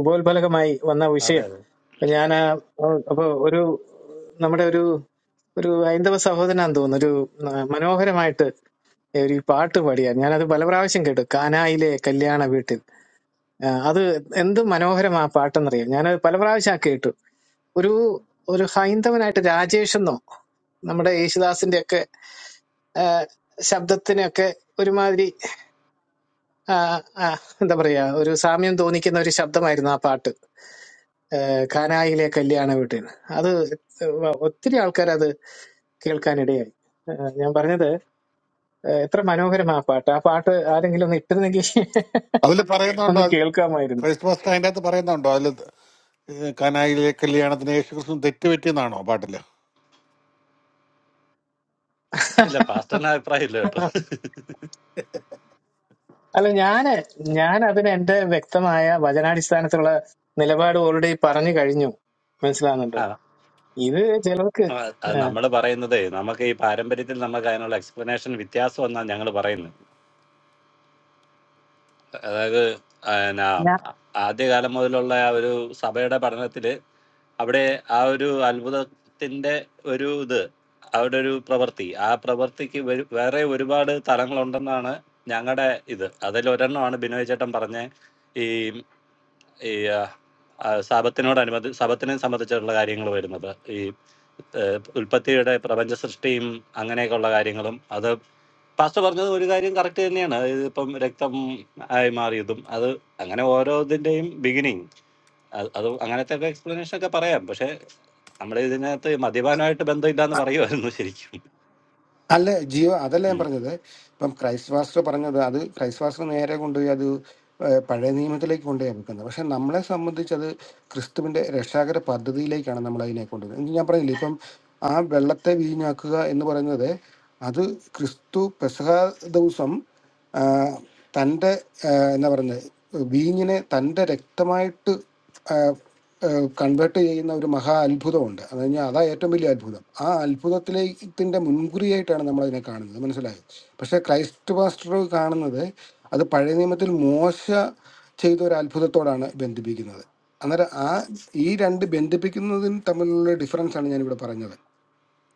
Speaker 6: ഉപോത്ഫലകമായി വന്ന
Speaker 7: അതെ
Speaker 6: വിഷയം
Speaker 7: അതെ
Speaker 6: അപ്പൊ ഞാൻ ആ, അപ്പൊ ഒരു നമ്മുടെ ഒരു ഒരു ഹൈന്ദവ സഹോദരനാന്ന് തോന്നുന്നു ഒരു ആ, മനോഹരമായിട്ട് ഒരു പാട്ട് പാടിയാ ഞാനത് പല പ്രാവശ്യം കേട്ടു കാനായിലെ കല്യാണ വീട്ടിൽ ആ, അത് എന്ത് മനോഹരമാ ആ പാട്ടെന്നറിയോ ഞാനത് പല പ്രാവശ്യം ആ കേട്ടു ഒരു ഒരു ഹൈന്ദവനായിട്ട് രാജേഷ് എന്നോ നമ്മുടെ യേശുദാസിന്റെ ഒക്കെ ആ, ശബ്ദത്തിനൊക്കെ ഒരുമാതിരി ആ, ആ, എന്താ പറയാ ഒരു സാമ്യം തോന്നിക്കുന്ന ഒരു ശബ്ദമായിരുന്നു ആ പാട്ട് ആ, കാനായിലെ കല്യാണ വീട്ടിന് അത് വ- ഒത്തിരി ആൾക്കാർ അത് കേൾക്കാനിടയായി ആ, ഞാൻ പറഞ്ഞത് ആ, എത്ര മനോഹരമാ ആ പാട്ട് ആ പാട്ട് ആരെങ്കിലും ഒന്ന് ഇട്ടിരുന്നെങ്കിൽ
Speaker 11: അതിൽ പറയുന്നുണ്ടോ
Speaker 6: ഒന്ന് കേൾക്കാമായിരുന്നു
Speaker 11: ക്രൈസ്റ്റ് പാസ്റ്റർ അതിൻ്റെ അകത്ത് പറയുന്നുണ്ടോ അതിൽ കനായിലെ കല്യാണത്തിന് യേശു ക്രിസ്തു തെറ്റ് പറ്റിയെന്നാണോ പാട്ടില്
Speaker 7: ഇല്ല പാസ്റ്ററിന് അഭിപ്രായമില്ല കേട്ടോ
Speaker 6: അല്ല ഞാന് ഞാൻ അതിന് എന്റെ വ്യക്തമായ വചനാടിസ്ഥാനത്തിലുള്ള നിലപാട് ഓൾറെഡി പറഞ്ഞു കഴിഞ്ഞു മനസ്സിലാകുന്നുണ്ടോ
Speaker 7: ആ
Speaker 6: ഇത് ചിലർക്ക് ആ,
Speaker 7: നമ്മൾ പറയുന്നതേ നമുക്ക് ഈ പാരമ്പര്യത്തിൽ നമുക്ക് അതിനുള്ള എക്സ്പ്ലനേഷൻ വ്യത്യാസം എന്നാണ് ഞങ്ങൾ പറയുന്നത് അതായത് ആ, പിന്നെ
Speaker 6: ഞാൻ-
Speaker 7: ആദ്യകാലം മുതലുള്ള ആ ഒരു സഭയുടെ പഠനത്തിൽ അവിടെ ആ ഒരു അത്ഭുതത്തിന്റെ ഒരു ഇത് അവിടെ ഒരു പ്രവൃത്തി ആ പ്രവൃത്തിക്ക് വേ- വേറെ ഒരുപാട് തലങ്ങളുണ്ടെന്നാണ് ഞങ്ങളുടെ ഇത് അതിൽ ഒരെണ്ണമാണ് ബിനോയ് ചേട്ടൻ പറഞ്ഞ ഈ ഈ ആ, ആ, ശബത്തിനോടനുബന്ധി ശബത്തിനെ സംബന്ധിച്ചിട്ടുള്ള കാര്യങ്ങൾ വരുന്നത് ഈ ഏഹ്, ഉൽപ്പത്തിയുടെ പ്രപഞ്ച സൃഷ്ടിയും അങ്ങനെയൊക്കെയുള്ള കാര്യങ്ങളും അത് പാസ്റ്റർ പറഞ്ഞത് ഒരു കാര്യം കറക്റ്റ് തന്നെയാണ് ഇത് ഇപ്പം രക്തം ആയി മാറിയതും അത് അങ്ങനെ ഓരോ ഇതിന്റെയും ബിഗിനിങ് അത് അത് അങ്ങനത്തെ ഒക്കെ എക്സ്പ്ലനേഷൻ ഒക്കെ പറയാം പക്ഷെ നമ്മുടെ ഇതിനകത്ത് മദ്യപാനമായിട്ട് ബന്ധമില്ലാന്ന് പറയുമായിരുന്നു ശരിക്കും
Speaker 1: അല്ല ജിയോ അതല്ല ഞാൻ
Speaker 7: ഉം,
Speaker 1: പറഞ്ഞത് ഇപ്പം ക്രൈസ്റ്റ് പാസ്റ്റർ പറഞ്ഞത് അത് ക്രൈസ്റ്റ് പാസ്റ്റർ നേരെ കൊണ്ടുപോയി അത് ഏഹ്, പഴയ നിയമത്തിലേക്ക് കൊണ്ടുപോയി വെക്കുന്നത് പക്ഷെ നമ്മളെ സംബന്ധിച്ച് അത് ക്രിസ്തുവിന്റെ രക്ഷാകര പദ്ധതിയിലേക്കാണ് നമ്മൾ അതിനെ കൊണ്ടുവരുന്നത് ഞാൻ പറഞ്ഞില്ലേ ഇപ്പം ആ വെള്ളത്തെ വീഞ്ഞാക്കുക എന്ന് പറയുന്നത് അത് ക്രിസ്തു പെസഹ ദിവസം ആ, തൻ്റെ ആ, എന്നാ പറയുന്നത് വീഞ്ഞിനെ തൻ്റെ രക്തമായിട്ട് കൺവേർട്ട് ചെയ്യുന്ന ഒരു മഹാ അത്ഭുതമുണ്ട് അത് കഴിഞ്ഞാൽ അതാ ഏറ്റവും വലിയ അത്ഭുതം ആ അത്ഭുതത്തിലേക്കിൻ്റെ മുൻകുറിയായിട്ടാണ് നമ്മൾ അതിനെ കാണുന്നത് മനസ്സിലായോ പക്ഷേ ക്രൈസ്റ്റ് പാസ്റ്റർ കാണുന്നത് അത് പഴയ നിയമത്തിൽ മോശ ചെയ്ത ഒരു അത്ഭുതത്തോടാണ് ബന്ധിപ്പിക്കുന്നത് അന്നേരം ആ ഈ രണ്ട് ബന്ധിപ്പിക്കുന്നതിന് തമ്മിലുള്ള ഡിഫറൻസ് ആണ് ഞാനിവിടെ പറഞ്ഞത്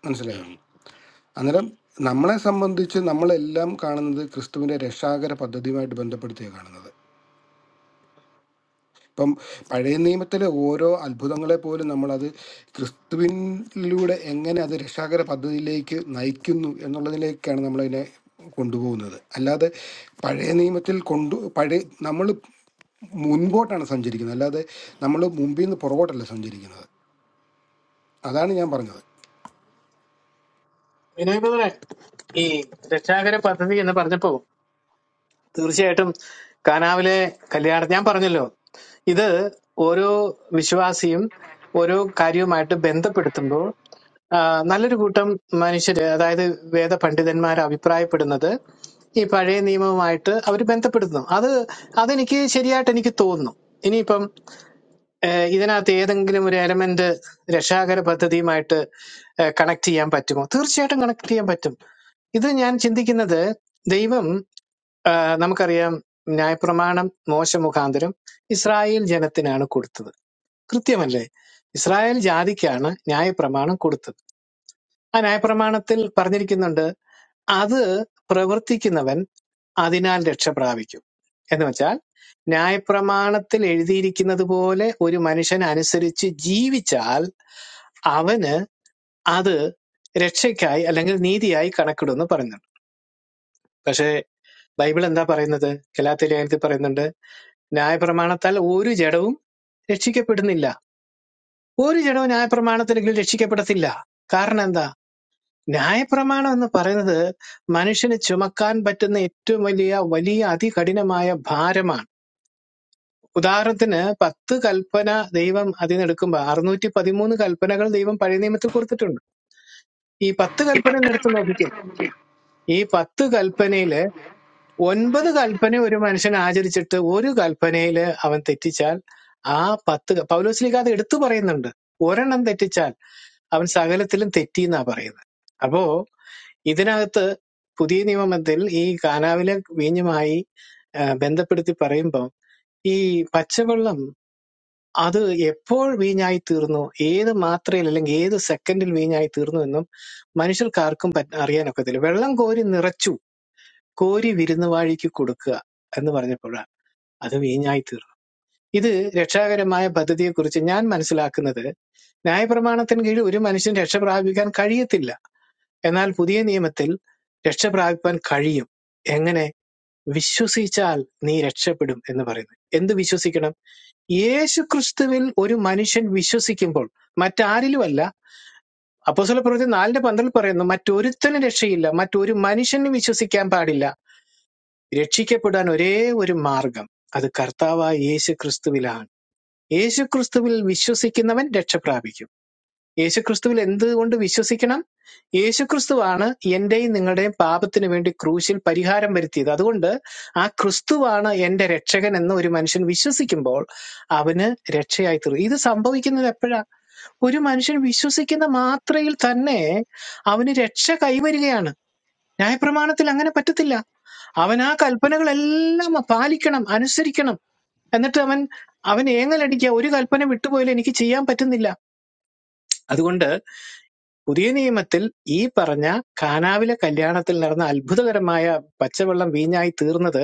Speaker 1: മനസ്സിലായോ
Speaker 7: ഉം.
Speaker 1: അന്നേരം നമ്മളെ സംബന്ധിച്ച് നമ്മളെല്ലാം കാണുന്നത് ക്രിസ്തുവിൻ്റെ രക്ഷാകര പദ്ധതിയുമായിട്ട് ബന്ധപ്പെടുത്തിയാണ് കാണുന്നത് ഇപ്പം പഴയ നിയമത്തിലെ ഓരോ അത്ഭുതങ്ങളെ പോലും നമ്മളത് ക്രിസ്തുവിനിലൂടെ എങ്ങനെ അത് രക്ഷാകര പദ്ധതിയിലേക്ക് നയിക്കുന്നു എന്നുള്ളതിലേക്കാണ് നമ്മളതിനെ കൊണ്ടുപോകുന്നത് അല്ലാതെ പഴയ നിയമത്തിൽ കൊണ്ടു പഴയ നമ്മൾ മുൻപോട്ടാണ് സഞ്ചരിക്കുന്നത് അല്ലാതെ നമ്മൾ മുമ്പിൽ നിന്ന് പുറകോട്ടല്ല സഞ്ചരിക്കുന്നത് അതാണ് ഞാൻ പറഞ്ഞത്
Speaker 6: വിനോദ ഈ രക്ഷാകര പദ്ധതി എന്ന് പറഞ്ഞപ്പോ തീർച്ചയായിട്ടും കാനാവിലെ കല്യാണം ഞാൻ പറഞ്ഞല്ലോ ഇത് ഓരോ വിശ്വാസിയും ഓരോ കാര്യവുമായിട്ട് ബന്ധപ്പെടുത്തുമ്പോൾ ആ, നല്ലൊരു കൂട്ടം മനുഷ്യര് അതായത് വേദ പണ്ഡിതന്മാർ അഭിപ്രായപ്പെടുന്നത് ഈ പഴയ നിയമവുമായിട്ട് അവർ ബന്ധപ്പെടുത്തുന്നു അത് അതെനിക്ക് ശരിയായിട്ട് എനിക്ക് തോന്നുന്നു ഇനിയിപ്പം ഏഹ് ഇതിനകത്ത് ഏതെങ്കിലും ഒരു എലമെന്റ് രക്ഷാകര പദ്ധതിയുമായിട്ട് കണക്ട് ചെയ്യാൻ പറ്റുമോ തീർച്ചയായിട്ടും കണക്ട് ചെയ്യാൻ പറ്റും ഇത് ഞാൻ ചിന്തിക്കുന്നത് ദൈവം ആഹ് നമുക്കറിയാം ന്യായപ്രമാണം മോശ മുഖാന്തരം ഇസ്രായേൽ ജനത്തിനാണ് കൊടുത്തത് കൃത്യമല്ലേ ഇസ്രായേൽ ജാതിക്കാണ് ന്യായപ്രമാണം കൊടുത്തത് ആ ന്യായപ്രമാണത്തിൽ പറഞ്ഞിരിക്കുന്നുണ്ട് അത് പ്രവർത്തിക്കുന്നവൻ അതിനാൽ രക്ഷ പ്രാപിക്കും എന്ന് വെച്ചാൽ ന്യായപ്രമാണത്തിൽ എഴുതിയിരിക്കുന്നത് പോലെ ഒരു മനുഷ്യൻ അനുസരിച്ച് ജീവിച്ചാൽ അവന് അത് രക്ഷയ്ക്കായി അല്ലെങ്കിൽ നീതിയായി കണക്കിടുമെന്ന് പറയുന്നുണ്ട് പക്ഷേ ബൈബിൾ എന്താ പറയുന്നത് ഗലാത്തിലേഖനത്തിൽ പറയുന്നുണ്ട് ന്യായപ്രമാണത്താൽ ഒരു ജഡവും രക്ഷിക്കപ്പെടുന്നില്ല ഒരു ജഡവും ന്യായപ്രമാണത്തിനെങ്കിലും രക്ഷിക്കപ്പെടത്തില്ല കാരണം എന്താ ന്യായപ്രമാണം എന്ന് പറയുന്നത് മനുഷ്യന് ചുമക്കാൻ പറ്റുന്ന ഏറ്റവും വലിയ വലിയ അതികഠിനമായ ഭാരമാണ് ഉദാഹരണത്തിന് പത്ത് കൽപ്പന ദൈവം അതിനെടുക്കുമ്പോൾ അറുന്നൂറ്റി പതിമൂന്ന് കൽപ്പനകൾ ദൈവം പഴയ നിയമത്തിൽ കൊടുത്തിട്ടുണ്ട് ഈ പത്ത് കൽപ്പന ഒന്ന് എടുത്ത് നോക്കിക്കുക ഈ പത്ത് കൽപ്പനയില് ഒൻപത് കൽപ്പന ഒരു മനുഷ്യൻ ആചരിച്ചിട്ട് ഒരു കൽപ്പനയില് അവൻ തെറ്റിച്ചാൽ ആ പത്ത് ക- പൗലോസ് ലീഗ അത് എടുത്തു പറയുന്നുണ്ട് ഒരെണ്ണം തെറ്റിച്ചാൽ അവൻ സകലത്തിലും തെറ്റി എന്നാ പറയുന്നത് അപ്പോ ഇതിനകത്ത് പുതിയ നിയമത്തിൽ ഈ കാനാവിലെ വീഞ്ഞുമായി ആ, ബന്ധപ്പെടുത്തി പറയുമ്പോൾ ഈ പച്ചവെള്ളം അത് എപ്പോൾ വീഞ്ഞായി തീർന്നു ഏത് മാത്രയിൽ അല്ലെങ്കിൽ ഏത് സെക്കൻഡിൽ വീഞ്ഞായി തീർന്നു എന്നും മനുഷ്യർക്കാർക്കും പറ്റ- അറിയാനൊക്കത്തില്ല വെള്ളം കോരി നിറച്ചു കോരി വിരുന്നുവാഴിക്ക് കൊടുക്കുക എന്ന് പറഞ്ഞപ്പോഴാണ് അത് വീഞ്ഞായി തീർന്നു ഇത് രക്ഷാകരമായ പദ്ധതിയെക്കുറിച്ച് ഞാൻ മനസ്സിലാക്കുന്നത് ന്യായപ്രമാണത്തിന് കീഴിൽ ഒരു മനുഷ്യൻ രക്ഷ പ്രാപിക്കാൻ കഴിയത്തില്ല എന്നാൽ പുതിയ നിയമത്തിൽ രക്ഷ പ്രാപിപ്പാൻ കഴിയും എങ്ങനെ വിശ്വസിച്ചാൽ നീ രക്ഷപ്പെടും എന്ന് പറയുന്നു എന്ത് വിശ്വസിക്കണം യേശു ക്രിസ്തുവിൽ ഒരു മനുഷ്യൻ വിശ്വസിക്കുമ്പോൾ മറ്റാരിലുമല്ല അപ്പോസ്തല പ്രവൃത്തി നാലിന്റെ പന്ത്രണ്ടിൽ പറയുന്നു മറ്റൊരുത്തനും രക്ഷയില്ല മറ്റൊരു മനുഷ്യനും വിശ്വസിക്കാൻ പാടില്ല രക്ഷിക്കപ്പെടാൻ ഒരേ ഒരു മാർഗം അത് കർത്താവായ യേശു ക്രിസ്തുവിലാണ് യേശു ക്രിസ്തുവിൽ വിശ്വസിക്കുന്നവൻ രക്ഷ പ്രാപിക്കും യേശുക്രിസ്തുവിൽ എന്തുകൊണ്ട് വിശ്വസിക്കണം യേശുക്രിസ്തുവാണ് എന്റെയും നിങ്ങളുടെയും പാപത്തിന് വേണ്ടി ക്രൂശിൽ പരിഹാരം വരുത്തിയത് അതുകൊണ്ട് ആ ക്രിസ്തുവാണ് എന്റെ രക്ഷകൻ എന്ന് ഒരു മനുഷ്യൻ വിശ്വസിക്കുമ്പോൾ അവന് രക്ഷയായി തീർന്നു ഇത് സംഭവിക്കുന്നത് എപ്പോഴാ ഒരു മനുഷ്യൻ വിശ്വസിക്കുന്ന മാത്രയിൽ തന്നെ അവന് രക്ഷ കൈവരികയാണ് ന്യായപ്രമാണത്തിൽ അങ്ങനെ പറ്റത്തില്ല അവൻ ആ കൽപ്പനകളെല്ലാം പാലിക്കണം അനുസരിക്കണം എന്നിട്ട് അവൻ അവൻ ഏങ്ങലടിക്കുക ഒരു കൽപ്പന വിട്ടുപോയാലും എനിക്ക് ചെയ്യാൻ പറ്റുന്നില്ല അതുകൊണ്ട് പുതിയ നിയമത്തിൽ ഈ പറഞ്ഞ കാനാവിലെ കല്യാണത്തിൽ നടന്ന അത്ഭുതകരമായ പച്ചവെള്ളം വീഞ്ഞായി തീർന്നത്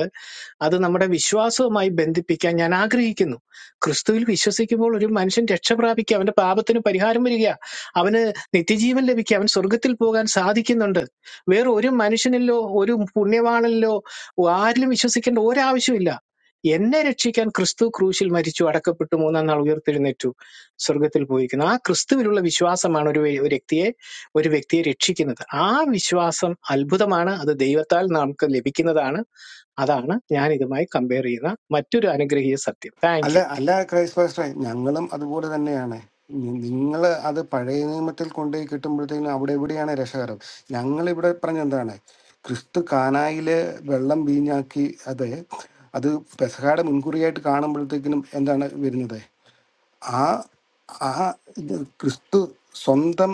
Speaker 6: അത് നമ്മുടെ വിശ്വാസവുമായി ബന്ധിപ്പിക്കാൻ ഞാൻ ആഗ്രഹിക്കുന്നു ക്രിസ്തുവിൽ വിശ്വസിക്കുമ്പോൾ ഒരു മനുഷ്യൻ രക്ഷ പ്രാപിക്കുക അവന്റെ പാപത്തിന് പരിഹാരം വരിക അവന് നിത്യജീവൻ ലഭിക്കുക അവൻ സ്വർഗത്തിൽ പോകാൻ സാധിക്കുന്നുണ്ട് വേറെ ഒരു മനുഷ്യനിലോ ഒരു പുണ്യവാണനിലോ ആരിലും വിശ്വസിക്കേണ്ട ഒരാവശ്യമില്ല എന്നെ രക്ഷിക്കാൻ ക്രിസ്തു ക്രൂശിൽ മരിച്ചു അടക്കപ്പെട്ടു മൂന്നാം നാൾ ഉയർത്തെഴുന്നേറ്റു സ്വർഗത്തിൽ പോയിരിക്കുന്നത് ആ ക്രിസ്തുവിലുള്ള വിശ്വാസമാണ് ഒരു വ്യ- ഒരു വ്യക്തിയെ ഒരു വ്യക്തിയെ രക്ഷിക്കുന്നത് ആ വിശ്വാസം അത്ഭുതമാണ് അത് ദൈവത്താൽ നമുക്ക് ലഭിക്കുന്നതാണ് അതാണ് ഞാൻ ഇതുമായി കമ്പയർ ചെയ്യുന്ന മറ്റൊരു അനുഗ്രഹീയ സത്യം താങ്ക്
Speaker 1: അല്ല
Speaker 6: യു
Speaker 1: അല്ല ക്രൈസ്റ്റ് പാസ്റ്ററെ ഞങ്ങളും അതുപോലെ തന്നെയാണ് നിങ്ങൾ അത് പഴയ നിയമത്തിൽ കൊണ്ടുപോയി കിട്ടുമ്പോഴത്തേക്കും അവിടെ എവിടെയാണ് രക്ഷകരം ഞങ്ങൾ ഇവിടെ പറഞ്ഞെന്താണ് ക്രിസ്തു കാനായില് വെള്ളം വീഞ്ഞാക്കി അത് അത് പെസഹാടെ മുൻകുറിയായിട്ട് കാണുമ്പോഴത്തേക്കിനും എന്താണ് വരുന്നത് ആ ആ ഇത് ക്രിസ്തു സ്വന്തം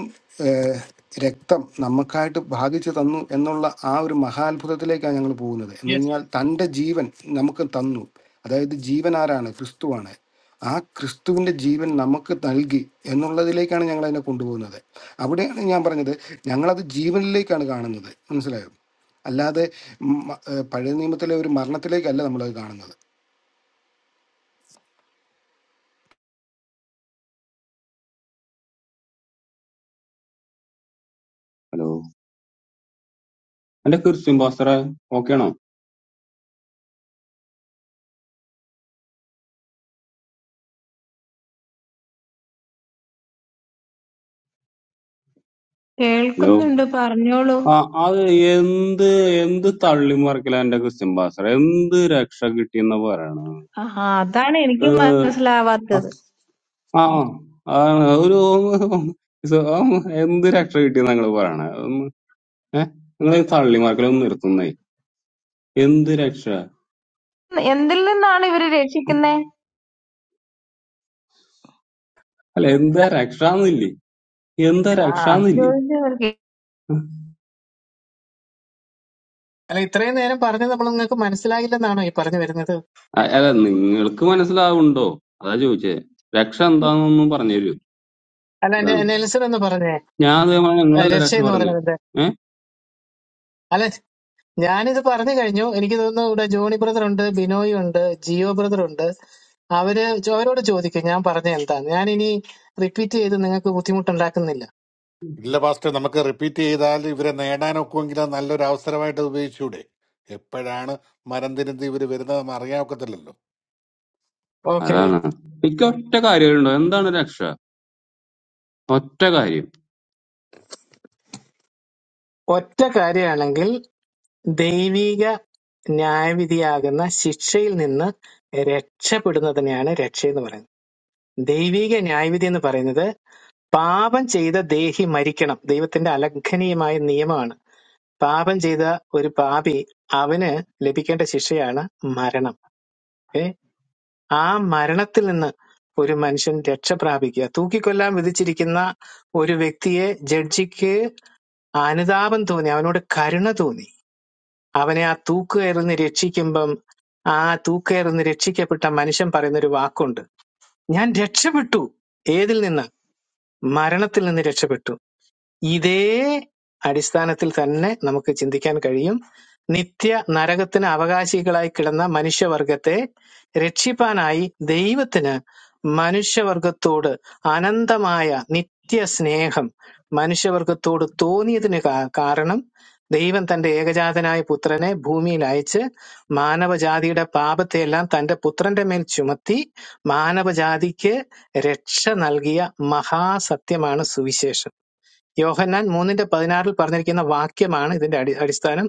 Speaker 1: ഏഹ്, രക്തം നമുക്കായിട്ട് ഭാഗിച്ചു തന്നു എന്നുള്ള ആ ഒരു മഹാത്ഭുതത്തിലേക്കാണ് ഞങ്ങൾ പോകുന്നത് എന്ന് പറഞ്ഞാൽ തൻ്റെ ജീവൻ നമുക്ക് തന്നു അതായത് ജീവൻ ആരാണ് ക്രിസ്തുവാണ് ആ ക്രിസ്തുവിൻ്റെ ജീവൻ നമുക്ക് നൽകി എന്നുള്ളതിലേക്കാണ് ഞങ്ങൾ അതിനെ കൊണ്ടുപോകുന്നത് അവിടെയാണ് ഞാൻ പറഞ്ഞത് ഞങ്ങളത് ജീവനിലേക്കാണ് കാണുന്നത് മനസ്സിലായോ അല്ലാതെ മ- ഏഹ് പഴയ നിയമത്തിലെ ഒരു മരണത്തിലേക്കല്ല നമ്മളത് കാണുന്നത്
Speaker 12: ഹലോ എന്റെ ക്രിസ്ത്യൻ പാസ്റ്ററെ ഓക്കെ ആണോ ഹലോ
Speaker 13: കേൾക്കുന്നുണ്ട് പറഞ്ഞോളൂ
Speaker 12: ആ അത് എന്ത് എന്ത് തള്ളി മറിക്കല എന്റെ ക്രിസ്ത്യൻ പാസ്റ്റർ എന്ത് രക്ഷ കിട്ടിയെന്ന് പറയണ
Speaker 13: ആ അതാണ് എനിക്ക്
Speaker 12: ഏഹ്,
Speaker 13: മനസ്സിലാവാത്തത്
Speaker 12: ആ ആ ആ, ഒരു സ- ആ, എന്ത് രക്ഷ കിട്ടിയെന്ന് ഞങ്ങള് പറയണ ഏഹ് നിങ്ങൾ തള്ളി മറിക്കലൊന്നും നിർത്തുന്നേ എന്ത് രക്ഷ
Speaker 13: എന്തിൽ നിന്നാണ് ഇവര് രക്ഷിക്കുന്നേ
Speaker 12: അല്ല എന്താ രക്ഷാന്നില്ലേ എന്താ
Speaker 13: ആ അത്
Speaker 12: രക്ഷാന്നില്ലേ
Speaker 13: ചോദിച്ചു
Speaker 6: അല്ല ഇത്രയും നേരം പറഞ്ഞത് നമ്മൾ നിങ്ങൾക്ക് മനസ്സിലായില്ലെന്നാണോ ഈ പറഞ്ഞു വരുന്നത്
Speaker 12: അ- അല്ല നിങ്ങൾക്ക് മനസ്സിലാവുണ്ടോ അതാ ചോദിച്ചേ രക്ഷ എന്താന്നൊന്നും പറഞ്ഞു
Speaker 6: അല്ല
Speaker 12: തരൂ
Speaker 6: നെ- നെൽസൺ എന്ന് പറഞ്ഞേ
Speaker 12: ഞാൻ അത് പറഞ്ഞ
Speaker 6: ഏഹ്
Speaker 12: നിങ്ങളല്ല
Speaker 6: രക്ഷ
Speaker 12: രക്ഷ
Speaker 6: എന്ന്
Speaker 12: പറഞ്ഞേ
Speaker 6: പറഞ്ഞത്
Speaker 12: ഏ
Speaker 6: അല്ല, ഞാനിത് പറഞ്ഞു കഴിഞ്ഞു എനിക്ക് തോന്നുന്നു ഇവിടെ ജോണി ബ്രദർ ഉണ്ട് ബിനോയ് ഉണ്ട് ജിയോ ബ്രദർ ഉണ്ട് അവര് ചോ- അവരോട് ചോദിക്കും ഞാൻ പറഞ്ഞ എന്താ ഞാൻ ഇനി റിപ്പീറ്റ് ചെയ്ത് നിങ്ങൾക്ക് ബുദ്ധിമുട്ടുണ്ടാക്കുന്നില്ല
Speaker 11: ഇല്ല പാസ്റ്റർ നമുക്ക് റിപ്പീറ്റ് ചെയ്താൽ ഇവരെ നേടാനൊക്കുമെങ്കിൽ അത് നല്ലൊരു അവസരമായിട്ട് അത് ഉപയോഗിച്ചൂടെ എപ്പോഴാണ് മരം തിരുന്ന് ഇവർ വരുന്നത് നമ്മൾ അറിയാൻ ഒക്കത്തില്ലല്ലോ
Speaker 6: ഓക്കെ
Speaker 12: അതാണ് എനിക്ക് ഒറ്റ കാര്യമുണ്ടോ എന്താണ് രക്ഷ ഒറ്റ കാര്യം
Speaker 6: ഒറ്റ കാര്യമാണെങ്കിൽ ദൈവിക ന്യായവിധിയാകുന്ന ശിക്ഷയിൽ നിന്ന് രക്ഷപ്പെടുന്നതിനെയാണ് രക്ഷ എന്ന് പറയുന്നത് ദൈവിക ന്യായവിധി എന്ന് പറയുന്നത് പാപം ചെയ്ത ദേഹി മരിക്കണം ദൈവത്തിന്റെ അലംഘനീയമായ നിയമമാണ് പാപം ചെയ്ത ഒരു പാപി അവന് ലഭിക്കേണ്ട ശിക്ഷയാണ് മരണം ഏ ആ മരണത്തിൽ നിന്ന് ഒരു മനുഷ്യൻ രക്ഷ പ്രാപിക്കുക തൂക്കിക്കൊല്ലാൻ വിധിച്ചിരിക്കുന്ന ഒരു വ്യക്തിയെ ജഡ്ജിക്ക് അനുതാപം തോന്നി അവനോട് കരുണ തോന്നി അവനെ ആ തൂക്കുകയറിന്ന് രക്ഷിക്കുമ്പം ആ തൂക്കയറിന്ന് രക്ഷിക്കപ്പെട്ട മനുഷ്യൻ പറയുന്ന ഒരു വാക്കുണ്ട് ഞാൻ രക്ഷപ്പെട്ടു ഏതിൽ നിന്ന് മരണത്തിൽ നിന്ന് രക്ഷപ്പെട്ടു ഇതേ അടിസ്ഥാനത്തിൽ തന്നെ നമുക്ക് ചിന്തിക്കാൻ കഴിയും നിത്യ നരകത്തിന് അവകാശികളായി കിടന്ന മനുഷ്യവർഗത്തെ രക്ഷിപ്പാനായി ദൈവത്തിന് മനുഷ്യവർഗത്തോട് അനന്തമായ നിത്യ സ്നേഹം മനുഷ്യവർഗത്തോട് തോന്നിയതിന് കാ- കാരണം ദൈവം തന്റെ ഏകജാതനായ പുത്രനെ ഭൂമിയിൽ അയച്ച് മാനവജാതിയുടെ പാപത്തെയെല്ലാം തന്റെ പുത്രന്റെ മേൽ ചുമത്തി മാനവജാതിക്ക് രക്ഷ നൽകിയ മഹാസത്യമാണ് സുവിശേഷം യോഹന്നാൻ മൂന്നിന്റെ പതിനാറിൽ പറഞ്ഞിരിക്കുന്ന വാക്യമാണ് ഇതിന്റെ അടി അടിസ്ഥാനം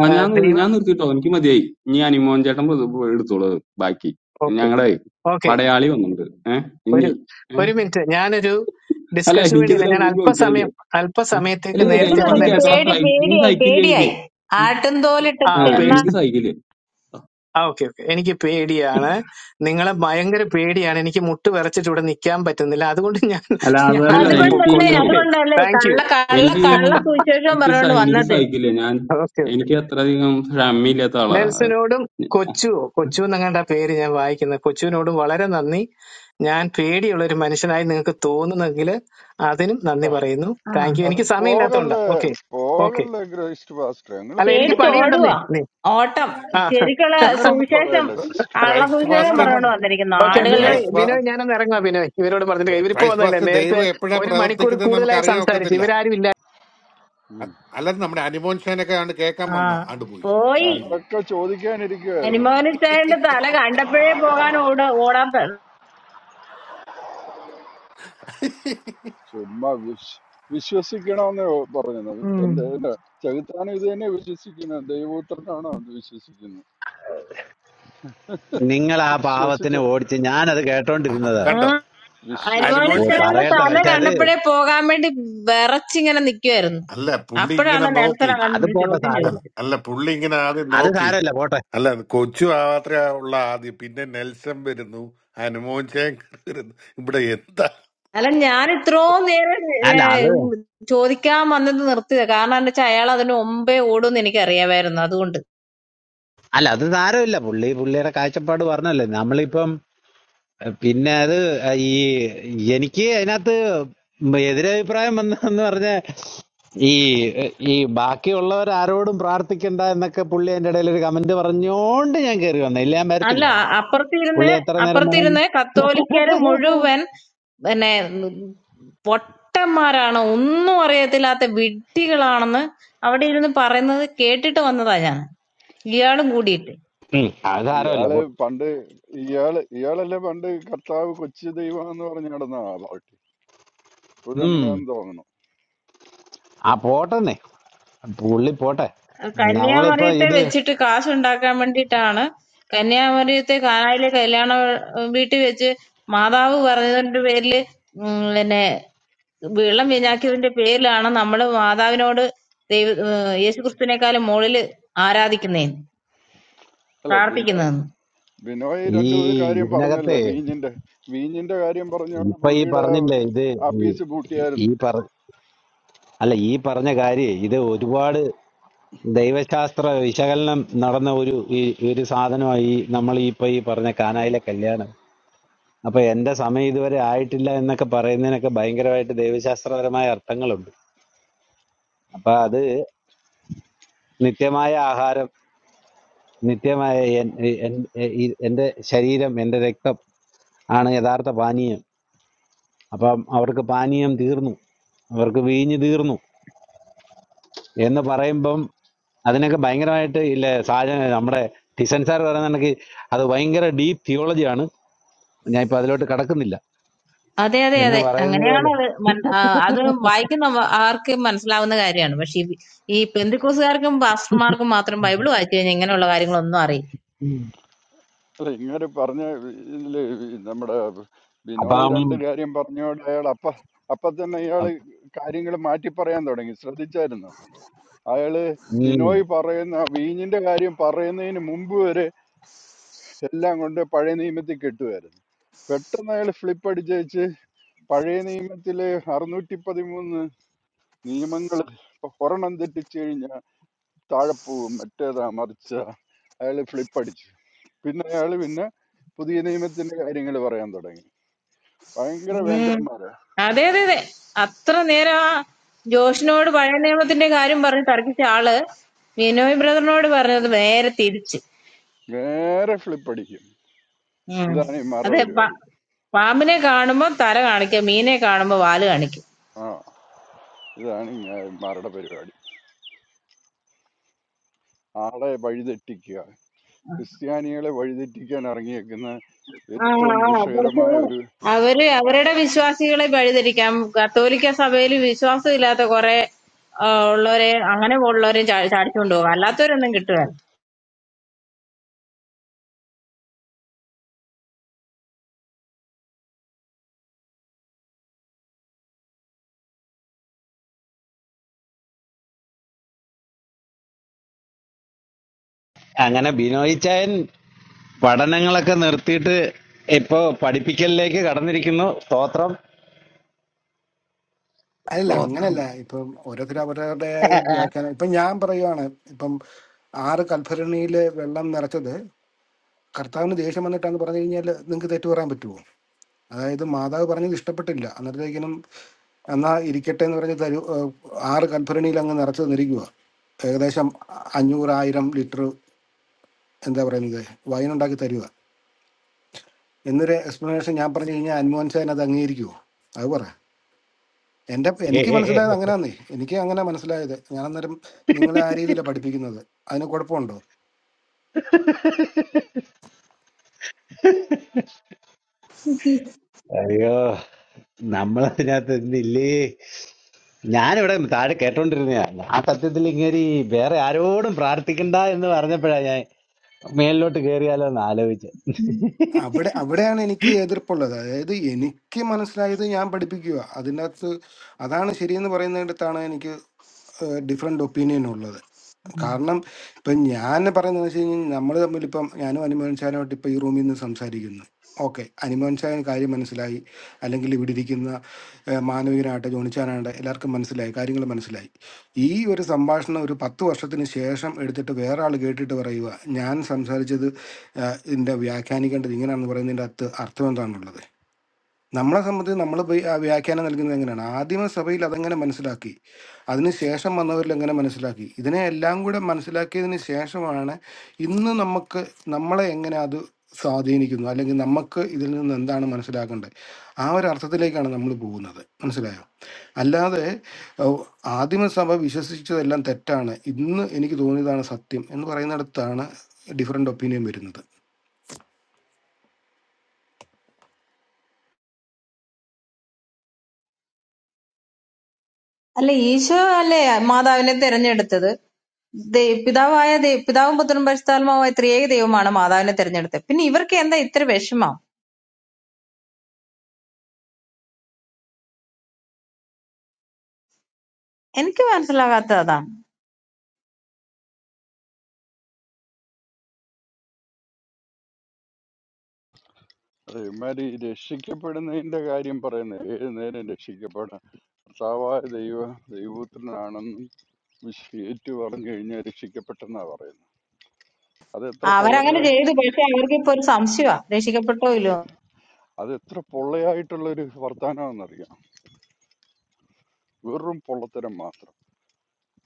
Speaker 12: ആ
Speaker 6: ആ,
Speaker 12: ഞാൻ നിർ-
Speaker 6: ദൈവം
Speaker 12: ഞാൻ നിർത്തിട്ടോ എനിക്ക് മതിയായി ഇനി അനിമോൻ ചേട്ടൻ ഇത് എടുത്തോളൂ ബാക്കി
Speaker 6: ഓക്കെ
Speaker 12: ഞങ്ങളെ
Speaker 6: ഓക്കെ
Speaker 12: പടയാളി വന്നിട്ടുണ്ട് ഏ
Speaker 6: ഒരു
Speaker 12: ഇനി ഏ?
Speaker 6: ഒരു മിനിറ്റ് ഞാനൊരു
Speaker 12: അല്ല
Speaker 6: ഡിസ്കഷന് വേണ്ടിയില്ല ഞാൻ
Speaker 12: എനിക്കിതിലൊന്നും ചോദിക്കാനില്ല
Speaker 6: അല്പസമയം
Speaker 12: ഏ? അല്ല
Speaker 6: അല്പസമയത്തേക്ക്
Speaker 12: ഇല്ല
Speaker 13: പേടി
Speaker 6: നേരത്തെ
Speaker 12: എനിക്ക് ഇനി
Speaker 6: വന്ന്
Speaker 13: തുടങ്ങി
Speaker 6: എന്റെ
Speaker 12: കേക്കള
Speaker 6: സ-
Speaker 13: പേടി
Speaker 12: സൈക്കിൾ, ഇനി
Speaker 13: പേടിയായി
Speaker 12: സഹിക്കില്ല എനിക്ക്
Speaker 13: പേടിയായി ആട്ടുംതോലിട്ട്
Speaker 6: ആ
Speaker 12: ഏ
Speaker 13: ചെന്ന
Speaker 12: എനിക്ക്
Speaker 6: പേഴ്സൺ
Speaker 12: സഹിക്കില്ല
Speaker 6: ആ ഓക്കെ ഓക്കെ എനിക്ക് പേടിയാണ് നിങ്ങളെ ഭയങ്കര പേടിയാണ് എനിക്ക് മുട്ട് വിറച്ചിട്ട് ഇവിടെ നിൽക്കാൻ പറ്റുന്നില്ല അതുകൊണ്ട് ഞാൻ
Speaker 12: അല്ല അതല്ല
Speaker 6: ഞാനൊന്ന്
Speaker 12: എനിക്ക്
Speaker 13: അതുകൊണ്ടല്ലേ
Speaker 6: പൊക്കോട്ടെ
Speaker 12: ഇങ്ങനെ
Speaker 6: ഓക്കെ
Speaker 13: അതുകൊണ്ടല്ലേ
Speaker 6: താങ്ക് യു
Speaker 13: കള്ള കള്ള
Speaker 12: എനിക്ക്
Speaker 13: കള്ള സുവിശേഷം
Speaker 12: എനിക്ക്
Speaker 13: പറഞ്ഞുകൊണ്ട്
Speaker 12: സഹി- എനിക്ക്
Speaker 13: വന്നത്
Speaker 12: സഹിക്കില്ല ഞാൻ
Speaker 6: ഓക്കെ ഓക്കെ
Speaker 12: എനിക്ക് അത്രയധികം ക്ഷമയില്ലാത്ത ആളാ
Speaker 6: നെൽസനോടും കൊച്ചുവോ കൊച്ചു എന്നങ്ങാണ്ട പേര് ഞാൻ വായിക്കുന്നത് കൊച്ചുവിനോടും വളരെ നന്ദി ഞാൻ പേടിയുള്ള ഒരു മനുഷ്യനായി നിങ്ങൾക്ക് തോന്നുന്നെങ്കിൽ അതിനും നന്ദി
Speaker 14: ആ,
Speaker 6: പറയുന്നു
Speaker 13: ആ
Speaker 6: താങ്ക് യു
Speaker 14: അത്
Speaker 6: എനിക്ക് സമയമില്ലാത്തതുകൊണ്ടാ
Speaker 14: പോകല്ലേ
Speaker 6: ഓക്കെ ഓക്കെ
Speaker 14: പോകല്ലേ ഗ്രേസ്റ്റ് പാസ്റ്റർ നിങ്ങൾ
Speaker 6: അല്ല
Speaker 14: നിങ്ങൾ
Speaker 6: എനിക്ക്
Speaker 14: പറയുന്ന
Speaker 6: പണിയുണ്ടെന്നേ
Speaker 13: പേടിച്ചോടുവാ
Speaker 14: കേക്ക്
Speaker 6: നീ
Speaker 13: ഓട്ടം
Speaker 6: ആ
Speaker 13: ശരിക്കുള്ള
Speaker 14: അങ്ങനൊന്നും
Speaker 13: സുവിശേഷം
Speaker 14: പറയല്ലേ സിസ്റ്റർ
Speaker 13: കള്ള
Speaker 11: ക്രൈസ്റ്റ്
Speaker 13: സുവിശേഷം
Speaker 11: പാസ്റ്റർ
Speaker 14: അങ്ങനൊന്നും
Speaker 13: പറഞ്ഞുകൊണ്ട്
Speaker 14: പ-
Speaker 13: വന്നിരിക്കുന്നു
Speaker 6: ഓക്കെ
Speaker 14: അങ്ങനെ
Speaker 13: ആടുകളുടെ
Speaker 6: ബിനോയ്
Speaker 11: ക്രൈസ്റ്റ് പാ-
Speaker 6: ബിനോയ്
Speaker 14: അ-
Speaker 6: ഞാനൊന്ന് ഇറങ്ങുക ബിനോയ് ഇവരോട് പറഞ്ഞിട്ട് ഇവരിപ്പോ
Speaker 11: ക്രൈസ്റ്റ്
Speaker 6: വന്നല്ലേ
Speaker 11: പാസ്റ്റർ
Speaker 6: നേരത്തെ
Speaker 11: ദൈവം എപ്പോഴാ
Speaker 6: ഒരു മണിക്കൂർ
Speaker 11: പ്രവർത്തിക്കുന്നത് നമുക്ക്
Speaker 6: കൂടുതലായി
Speaker 11: അറിയാൻ
Speaker 6: സംസാരിച്ചു
Speaker 11: ഒക്കത്തില്ല
Speaker 6: ഇവരാരും ഇല്ലായിരുന്നു
Speaker 14: ഉം.
Speaker 11: അ- അല്ലാതെ നമ്മുടെ അനുമോൻ ഷാനൊക്കെ ആണ് കേൾക്കാൻ
Speaker 13: ആ
Speaker 11: വന്ന ആണ്ട് പോയി
Speaker 13: പോയി
Speaker 11: അയ്യോ
Speaker 14: ഞങ്ങളൊക്കെ ചോദിക്കാനിരിക്കുവായിരുന്നു
Speaker 13: അനുമോനിച്ചായന്റെ തല കണ്ടപ്പോഴേ പോകാൻ ഓട ഓടാൻ ത-
Speaker 14: ചുമ്മാ വിശ് വിശ്വസിക്കണമെന്ന് പറഞ്ഞത്
Speaker 13: ഉം.
Speaker 14: എന്റെ എന്റെ ചെകുത്താനും ഇത് തന്നെ വിശ്വസിക്കുന്നത് ദൈവപുത്രനാണോ അത് വിശ്വസിക്കുന്നത്
Speaker 15: നിങ്ങൾ ആ
Speaker 14: വിശ്വസിച്ച
Speaker 15: പാവത്തിനെ ഓടിച്ച് ഞാനത് കേട്ടോണ്ടിരുന്നത്
Speaker 11: കണ്ടോ
Speaker 13: ഉം.
Speaker 11: അ- അനുമോൻ
Speaker 15: ഓ
Speaker 14: വിശ്വസിച്ച്
Speaker 11: ഷാൻ
Speaker 13: അനുമോനിച്ചായന്റെ
Speaker 15: പറയട്ടെ
Speaker 13: തല
Speaker 15: പക്ഷെ
Speaker 14: വിശ്വസിച്ചു
Speaker 15: അത്
Speaker 14: കഴിഞ്ഞാൽ
Speaker 13: കണ്ടപ്പോഴേ പോകാൻ വേണ്ടി വിറച്ചിങ്ങനെ നിക്കുവായിരുന്നു
Speaker 11: അല്ല പുള്ളി
Speaker 13: അപ്പോഴാണ്
Speaker 11: ഇങ്ങനെ
Speaker 13: നെൽസൺ
Speaker 11: നോക്കി
Speaker 15: അത്
Speaker 13: അങ്ങനെ
Speaker 15: പോട്ടെ
Speaker 13: ചോദ്യം
Speaker 15: സാരമില്ല
Speaker 11: അ-
Speaker 13: ചോദിച്ചത്
Speaker 11: അല്ല പുള്ളി ഇങ്ങനെ ആദ്യം
Speaker 15: അത്
Speaker 11: നോക്കി
Speaker 15: സാരമില്ല പോട്ടെ
Speaker 11: അല്ല കൊച്ചു മാത്രമേ ഉള്ള ആദ്യം പിന്നെ നെൽസൺ വരുന്നു ഹനുമോൻ ശേഖർ വരുന്നു ഇവിടെ എന്താ
Speaker 13: അല്ല ഞാൻ ഇത്രയും നേരം ഏ,
Speaker 15: അല്ല അത്
Speaker 13: ചോദിക്കാൻ വന്നത് നിർത്തിയത് കാരണം എന്താ വെച്ചാൽ അയാൾ അതിന് മുമ്പേ ഓടുമെന്ന് എനിക്കറിയാമായിരുന്നു അതുകൊണ്ട്
Speaker 15: അല്ല അത് സാരമില്ല പുള്ളി പുള്ളിയുടെ കാഴ്ചപ്പാട് പറഞ്ഞല്ലേ നമ്മളിപ്പം എഹ്, പിന്നെ അത് അഹ്, ഈ എനിക്ക് അതിനകത്ത് എതിരഭിപ്രായം വന്നതെന്ന് പറഞ്ഞ ഈ എഹ്, ഈ ബാക്കിയുള്ളവർ ആരോടും പ്രാർത്ഥിക്കണ്ട എന്നൊക്കെ പുള്ളി അതിന്റെ ഇടയിൽ ഒരു കമന്റ് പറഞ്ഞോണ്ട് ഞാൻ കയറി വന്ന ഇല്ല ഞാൻ
Speaker 13: അല്ല
Speaker 15: വരത്തില്ല
Speaker 13: അപ്പുറത്തിരുന്ന്
Speaker 15: പുള്ളി എത്ര നേരം വേണമെങ്കിൽ
Speaker 13: അപ്പുറത്തിരുന്ന് കത്തോലിക്കര് മുഴുവൻ പിന്നെ പൊട്ടന്മാരാണ് ഒന്നും അറിയത്തില്ലാത്ത വിഡ്ഢികളാണെന്ന് അവിടെ ഇരുന്ന് പറയുന്നത് കേട്ടിട്ട് വന്നതാ ഞാൻ ഇയാളും കൂടിയിട്ട്
Speaker 15: ഉം, അത് സാരമില്ല
Speaker 14: ഇയാളെ
Speaker 15: പോട്ടെ
Speaker 14: പണ്ട് ഇയാള് ഇയാളല്ലേ പണ്ട് കർത്താവ് കൊച്ചു ദൈവം എന്ന് പറഞ്ഞു നടന്ന ആ പാർട്ടി ഇപ്പോഴും
Speaker 15: ഉം
Speaker 14: അങ്ങനെയാന്ന് തോന്നുന്നു
Speaker 15: ആ പോട്ടെന്നേ പുള്ളി പോട്ടെ നമ്മളിപ്പോ
Speaker 13: കന്യാമറിയത്തെ
Speaker 15: ഇത്
Speaker 13: വെച്ചിട്ട് കാശുണ്ടാക്കാൻ വേണ്ടിയിട്ടാണ് കന്യാമറിയത്തെ കാനായിലെ കല്യാണ ഏഹ്, വീട്ടിൽ വെച്ച് മാതാവ് പറഞ്ഞതിന്റെ പേരില് ഉം, പിന്നെ വെള്ളം വീഞ്ഞാക്കിയതിന്റെ പേരിലാണ് നമ്മള് മാതാവിനോട് ദൈവ ഏഹ്, യേശുക്രിസ്തുവിനെക്കാളും മുകളില് ആരാധിക്കുന്നേ
Speaker 14: അല്ല ബിനോയ്
Speaker 13: പ്രാർത്ഥിക്കുന്നതെന്ന്
Speaker 14: ബിനോയ്
Speaker 15: ഈ
Speaker 14: രണ്ട് കാര്യം പറഞ്ഞല്ലോ
Speaker 15: ഇതിനകത്തെ
Speaker 14: വീഞ്ഞിന്റെ വീഞ്ഞിന്റെ കാര്യം പറഞ്ഞോണ്ട്
Speaker 15: ഇപ്പൊ ഈ
Speaker 14: പുള്ളിയുടെ
Speaker 15: പറഞ്ഞില്ലേ ഇത്
Speaker 14: ആ പീസ്
Speaker 15: ഈ ഈ
Speaker 14: പൂട്ടിയായിരുന്നു
Speaker 15: പറ അല്ല ഈ പറഞ്ഞ കാര്യേ ഇത് ഒരുപാട് ദൈവശാസ്ത്ര വിശകലനം നടന്ന ഒരു ഈ- ഒരു സാധനമായി ഈ നമ്മൾ ഇപ്പൊ ഈ പറഞ്ഞ കാനായിലെ കല്യാണം അപ്പൊ എന്റെ സമയം ഇതുവരെ ആയിട്ടില്ല എന്നൊക്കെ പറയുന്നതിനൊക്കെ ഭയങ്കരമായിട്ട് ദൈവശാസ്ത്രപരമായ അർത്ഥങ്ങളുണ്ട് അപ്പൊ അത് നിത്യമായ ആഹാരം നിത്യമായ എൻ- എൻ- എ- ഈ- എന്റെ ശരീരം എന്റെ രക്തം ആണ് യഥാർത്ഥ പാനീയം അപ്പം അവർക്ക് പാനീയം തീർന്നു അവർക്ക് വീഞ്ഞ് തീർന്നു എന്ന് പറയുമ്പം അതിനൊക്കെ ഭയങ്കരമായിട്ട് ഇല്ലേ സാജൻ നമ്മുടെ ടിസൻ സാർ പറയുന്ന കണക്ക് അത് ഭയങ്കര ഡീപ് തിയോളജിയാണ് ഞാൻ ഇപ്പൊ അതിലോട്ട് കടക്കുന്നില്ല
Speaker 13: അതെ അതെ
Speaker 15: എന്ന്
Speaker 13: അതെ
Speaker 15: പറയുന്നത്
Speaker 13: അങ്ങനെയാണ്
Speaker 15: പോലെ
Speaker 13: അത് മൻ- ആ, അത് വായിക്കുന്ന മ- ആർക്കും മനസ്സിലാവുന്ന കാര്യമാണ് പക്ഷെ ഈ ഈ പെന്തിക്കോസുകാർക്കും പാസ്റ്റർമാർക്കും മാത്രം ബൈബിൾ വായിച്ചു കഴിഞ്ഞാൽ ഇങ്ങനെയുള്ള കാര്യങ്ങളൊന്നും അറിയില്ല
Speaker 15: ഉം.
Speaker 14: അല്ല ഇങ്ങനെ പറഞ്ഞ ഇതില് നമ്മുടെ ബിനോയ്
Speaker 15: അപ്പം
Speaker 14: രണ്ട് കാര്യം പറഞ്ഞോണ്ട് അയാൾ അപ്പ അപ്പൊ തന്നെ ഇയാള്
Speaker 15: അ-
Speaker 14: കാര്യങ്ങൾ മാറ്റി പറയാൻ തുടങ്ങി ശ്രദ്ധിച്ചായിരുന്നു അയാള്
Speaker 15: ഉം.
Speaker 14: ബിനോയ് പറയുന്ന വീഞ്ഞിന്റെ കാര്യം പറയുന്നതിന് മുമ്പ് വരെ എല്ലാം കൊണ്ട് പഴയ നിയമത്തിൽ കെട്ടുമായിരുന്നു പെട്ടെന്ന് അയാൾ ഫ്ലിപ്പ് അടിച്ച് പഴയ നിയമത്തിലെ അറുന്നൂറ്റി പതിമൂന്ന് നിയമങ്ങൾ ഇപ്പൊ ഒരെണ്ണം തെറ്റിച്ചു കഴിഞ്ഞാൽ താഴെ പോവും മറ്റേതാ മറിച്ച അയാൾ ഫ്ലിപ്പടിച്ചു പിന്നെ അയാൾ പിന്നെ പുതിയ നിയമത്തിന്റെ കാര്യങ്ങൾ പറയാൻ തുടങ്ങി ഭയങ്കര
Speaker 13: ഉം.
Speaker 14: വേന്ദ്രന്മാരാ
Speaker 13: അതെ അതെ അതെ അത്ര നേരം ആ ജോഷിനോട് പഴയ നിയമത്തിന്റെ കാര്യം പറഞ്ഞ് തർക്കിച്ച ആള് ബിനോയ് ബ്രദറിനോട് പറഞ്ഞത്
Speaker 14: ഉം.
Speaker 13: നേരെ തിരിച്ച്
Speaker 14: നേരെ ഫ്ലിപ്പടിക്കും
Speaker 13: ഉം.
Speaker 14: ഇതാണ് ഇമാരുടെ
Speaker 13: അതെ പ-
Speaker 14: പരിപാടി
Speaker 13: പാമ്പിനെ കാണുമ്പോ തല കാണിക്കുക മീനെ കാണുമ്പോ വാല് കാണിക്കും
Speaker 14: ആ ഇതാണ് ഇമാരുടെ പരിപാടി ആളെ വഴിതെറ്റിക്കുക ക്രിസ്ത്യാനികളെ വഴിതെറ്റിക്കാൻ ഇറങ്ങിയേക്കുന്ന
Speaker 13: ആ
Speaker 14: ഏറ്റവും
Speaker 13: ആ പക്ഷേ
Speaker 14: വിഷകരമായ ഒരു
Speaker 13: അവര് അവരുടെ വിശ്വാസികളെ വഴിതിരിക്കാം കത്തോലിക്ക സഭയിൽ വിശ്വാസം ഇല്ലാത്ത കുറെ ആ, ഉള്ളവരെ അങ്ങനെ ഉള്ളവരെ ചാ- ചാടിച്ചുകൊണ്ട് പോകും അല്ലാത്തവരൊന്നും കിട്ടുകയല്ല
Speaker 15: അങ്ങനെ ബിനോയിച്ചായൻ പഠനങ്ങളൊക്കെ നിർത്തിയിട്ട് ഇപ്പൊ പഠിപ്പിക്കലിലേക്ക് കടന്നിരിക്കുന്നു സ്തോത്രം
Speaker 1: അല്ല
Speaker 12: ദോസ്തം
Speaker 1: അങ്ങനല്ല ഇപ്പം ഓരോരുത്തർ അവരവരുടെ വ്യാഖ്യാനം ഇപ്പം ഞാൻ പറയുവാണ് ഇപ്പം ആറ് കൽഭരണിയിൽ വെള്ളം നിറച്ചത് കർത്താവിന് ദേഷ്യം വന്നിട്ടാന്ന് പറഞ്ഞു കഴിഞ്ഞാൽ നിങ്ങൾക്ക് തെറ്റു പറയാൻ പറ്റുമോ അതായത് മാതാവ് പറഞ്ഞത് ഇഷ്ടപ്പെട്ടില്ല അന്നേരത്തേക്കിനും എന്നാ ഇരിക്കട്ടെ എന്ന് പറഞ്ഞ് തരൂ ഏഹ് ആറ് കൽഭരണിയിൽ അങ്ങ് നിറച്ചു തന്നിരിക്കുക ഏകദേശം അഞ്ഞൂറായിരം ലിറ്റർ എന്താ പറയുന്നത് വൈൻ ഉണ്ടാക്കി തരിക എന്നൊരു എക്സ്പ്ലനേഷൻ ഞാൻ പറഞ്ഞു കഴിഞ്ഞാൽ അൻമോഹൻ സാൻ അത് അംഗീകരിക്കുമോ അത് പറ എൻ്റെ എനിക്ക് മനസ്സിലായത് അങ്ങനെയാന്നേ എനിക്ക് അങ്ങനെ മനസ്സിലായത് ഞാൻ അന്നേരം നിങ്ങളെ ആ രീതിയിലാണ് പഠിപ്പിക്കുന്നത് അതിന് കുഴപ്പമുണ്ടോ
Speaker 15: അയ്യോ നമ്മളതിനകത്ത് ഇന്നില്ലേ ഞാനിവിടെ താഴെ കേട്ടോണ്ടിരുന്നതാണ് ആ സത്യത്തിൽ ഇങ്ങനെ വേറെ ആരോടും പ്രാർത്ഥിക്കണ്ട എന്ന് പറഞ്ഞപ്പോഴാ ഞാൻ മേലിലോട്ട് കയറിയാലോ എന്ന് ആലോചിച്ച്
Speaker 1: അവിടെ അവിടെയാണ് എനിക്ക് എതിർപ്പുള്ളത് അതായത് എനിക്ക് മനസ്സിലായത് ഞാൻ പഠിപ്പിക്കുക അതിൻ്റെ അകത്ത് അതാണ് ശരിയെന്ന് പറയുന്നിടത്താണ് എനിക്ക് ഡിഫറെൻ്റ് ഒപ്പീനിയൻ ഉള്ളത് കാരണം ഇപ്പം ഞാൻ പറയുന്നത് വെച്ച് കഴിഞ്ഞാൽ നമ്മൾ തമ്മിൽ ഇപ്പം ഞാനും അനുമോൻ ചാനുമായിട്ട് ഇപ്പം ഈ റൂമിൽ നിന്ന് സംസാരിക്കുന്നു ഓക്കെ അനുമോൻ ചാൻ കാര്യം മനസ്സിലായി അല്ലെങ്കിൽ ഇവിടെ ഇരിക്കുന്ന ഏഹ്, മാനവികനാകട്ടെ ജോണിച്ചാനാകട്ടെ എല്ലാവർക്കും മനസ്സിലായി കാര്യങ്ങൾ മനസ്സിലായി ഈ ഒരു സംഭാഷണം ഒരു പത്ത് വർഷത്തിന് ശേഷം എടുത്തിട്ട് വേറെ ആൾ കേട്ടിട്ട് പറയുക ഞാൻ സംസാരിച്ചത് ഏഹ്, ഇതിൻ്റെ വ്യാഖ്യാനിക്കേണ്ടത് ഇങ്ങനെയാണെന്ന് പറയുന്നതിൻ്റെ അകത്ത് അർത്ഥം എന്താണുള്ളത് നമ്മളെ സംബന്ധിച്ച് നമ്മൾ വ്യാഖ്യാനം നൽകുന്നത് എങ്ങനെയാണ് ആദിമ സഭയിൽ അതെങ്ങനെ മനസ്സിലാക്കി അതിന് ശേഷം വന്നവരിൽ എങ്ങനെ മനസ്സിലാക്കി ഇതിനെ എല്ലാം കൂടെ മനസ്സിലാക്കിയതിന് ശേഷമാണ് ഇന്ന് നമുക്ക് നമ്മളെ എങ്ങനെ അത് സ്വാധീനിക്കുന്നു അല്ലെങ്കിൽ നമുക്ക് ഇതിൽ നിന്ന് എന്താണ് മനസ്സിലാക്കേണ്ടത് ആ ഒരു അർത്ഥത്തിലേക്കാണ് നമ്മൾ പോകുന്നത് മനസ്സിലായോ അല്ലാതെ ഓ, ആദിമസഭ വിശ്വസിച്ചതെല്ലാം തെറ്റാണ് ഇന്ന് എനിക്ക് തോന്നിയതാണ് സത്യം എന്ന് പറയുന്നിടത്താണ് ഡിഫറെൻ്റ് ഒപ്പീനിയൻ വരുന്നത്
Speaker 13: അല്ല ഈശോ അല്ലേ മാതാവിനെ തിരഞ്ഞെടുത്തത് ദൈ- പിതാവായ ദൈ- പിതാവും പുത്രനും പരിശുദ്ധാത്മാവുമായ ത്രിയേക ദൈവമാണ് മാതാവിനെ തിരഞ്ഞെടുത്തത് പിന്നെ ഇവർക്ക് എന്താ ഇത്ര വിഷമം എനിക്ക് മനസ്സിലാകാത്തത് അതാണ്
Speaker 14: ഇമാര് ഈ രക്ഷിക്കപ്പെടുന്നതിന്റെ കാര്യം പറയുന്നത് ഏത് നേരം രക്ഷിക്കപ്പെടാം കർത്താവായ ദൈവ ദൈവത്തിനാണെന്നും ഷീറ്റ് പറഞ്ഞു കഴിഞ്ഞാൽ രക്ഷിക്കപ്പെട്ടെന്നാ പറയുന്നത് അത് എത്ര
Speaker 13: അവരങ്ങനെ
Speaker 14: പൊള്ളയാ
Speaker 13: ചെയ്തു പക്ഷെ അവർക്ക് ഇപ്പൊ ഒരു സംശയമാ രക്ഷിക്കപ്പെട്ടോ ഇല്ലയോ
Speaker 14: അത് എത്ര പൊള്ളയായിട്ടുള്ള ഒരു വർത്താനമാണെന്നറിയാം വെറും പൊള്ളത്തരം മാത്രം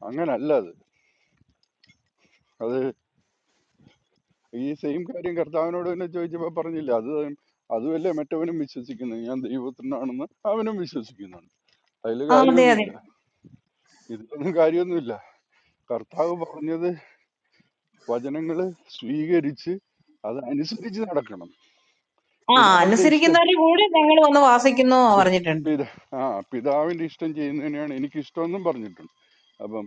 Speaker 14: അങ്ങനല്ല അത് അത് ഈ സെയിം കാര്യം കർത്താവിനോട് തന്നെ ചോദിച്ചപ്പോൾ പറഞ്ഞില്ല അത് അതുമല്ലേ മറ്റവനും വിശ്വസിക്കുന്നത് ഞാൻ ദൈവത്തിനാണെന്ന് അവനും വിശ്വസിക്കുന്നുണ്ട് അതിൽ
Speaker 13: ആ അതെ അതെ
Speaker 14: കാര്യമൊന്നുമില്ല ഇതിലൊന്നും കാര്യമൊന്നുമില്ല കർത്താവ് പറഞ്ഞത് വചനങ്ങൾ സ്വീകരിച്ച് അത് അനുസരിച്ച് നടക്കണം
Speaker 13: ആ
Speaker 14: പിതാവിന്റെ ഇഷ്ടം
Speaker 13: അനുസരിക്കുന്നവരുടെ കൂടെ ഞങ്ങൾ വന്ന് വാസിക്കുന്നു എന്ന്
Speaker 14: പി-
Speaker 13: പറഞ്ഞിട്ടുണ്ട്
Speaker 14: പിത ആ പിതാവിൻ്റെ ഇഷ്ടം ചെയ്യുന്നതിനെയാണ് എനിക്ക് ഇഷ്ടമെന്നും പറഞ്ഞിട്ടുണ്ട് അപ്പം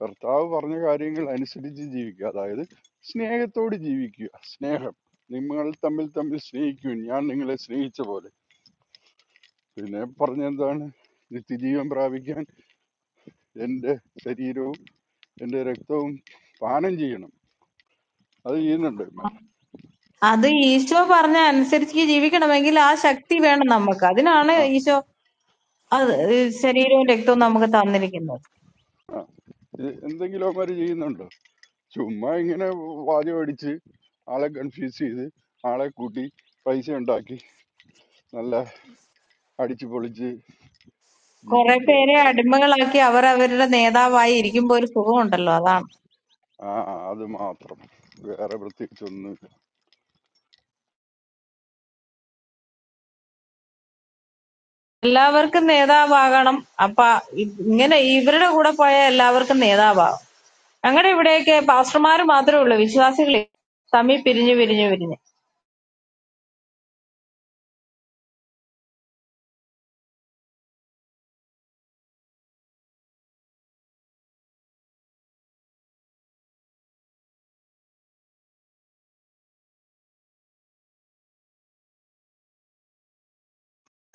Speaker 14: കർത്താവ് പറഞ്ഞ കാര്യങ്ങൾ അനുസരിച്ച് ജീവിക്കുക അതായത് സ്നേഹത്തോട് ജീവിക്കുക സ്നേഹം നിങ്ങൾ തമ്മിൽ തമ്മിൽ സ്നേഹിക്കും ഞാൻ നിങ്ങളെ സ്നേഹിച്ച പോലെ പിന്നെ പറഞ്ഞെന്താണ് നിത്യജീവൻ പ്രാപിക്കാൻ എൻ്റെ ശരീരവും എൻ്റെ രക്തവും പാനം ചെയ്യണം അത് ചെയ്യുന്നുണ്ട് ഇവന്മാര്.
Speaker 13: അത് ഈശോ പറഞ്ഞ അനുസരിച്ച് ജീവിക്കണമെങ്കിൽ ആ ശക്തി വേണം നമുക്ക് അതിനാണ്
Speaker 14: ആ
Speaker 13: ഈശോ അത് ശരീരവും രക്തവും നമുക്ക് തന്നിരിക്കുന്നത്
Speaker 14: ആ ഇത് എന്തെങ്കിലും അവന്മാർ ചെയ്യുന്നുണ്ടോ ചുമ്മാ ഇങ്ങനെ വാചകം അടിച്ച് ആളെ കൺഫ്യൂസ് ചെയ്ത് ആളെ കൂട്ടി പൈസ ഉണ്ടാക്കി നല്ല അടിച്ചു പൊളിച്ച്
Speaker 13: കുറെ
Speaker 14: ജീവിക്കുക
Speaker 13: പേരെ
Speaker 14: അത്ര തന്നെ
Speaker 13: അടിമകളാക്കി അവർ അവരുടെ നേതാവായി ഇരിക്കുമ്പോ ഒരു സുഖമുണ്ടല്ലോ അതാണ്
Speaker 14: ആ അത് മാത്രം വേറെ പ്രത്യേകിച്ചൊന്നുമില്ല
Speaker 13: എല്ലാവർക്കും നേതാവാകണം അപ്പൊ ഇ- ഇങ്ങനെ ഇവരുടെ കൂടെ പോയാൽ എല്ലാവർക്കും നേതാവാകും ഞങ്ങളുടെ ഇവിടെയൊക്കെ പാസ്റ്റർമാർ മാത്രമേ ഉള്ളൂ വിശ്വാസികളെ തമ്മിൽ പിരിഞ്ഞു പിരിഞ്ഞു പിരിഞ്ഞ്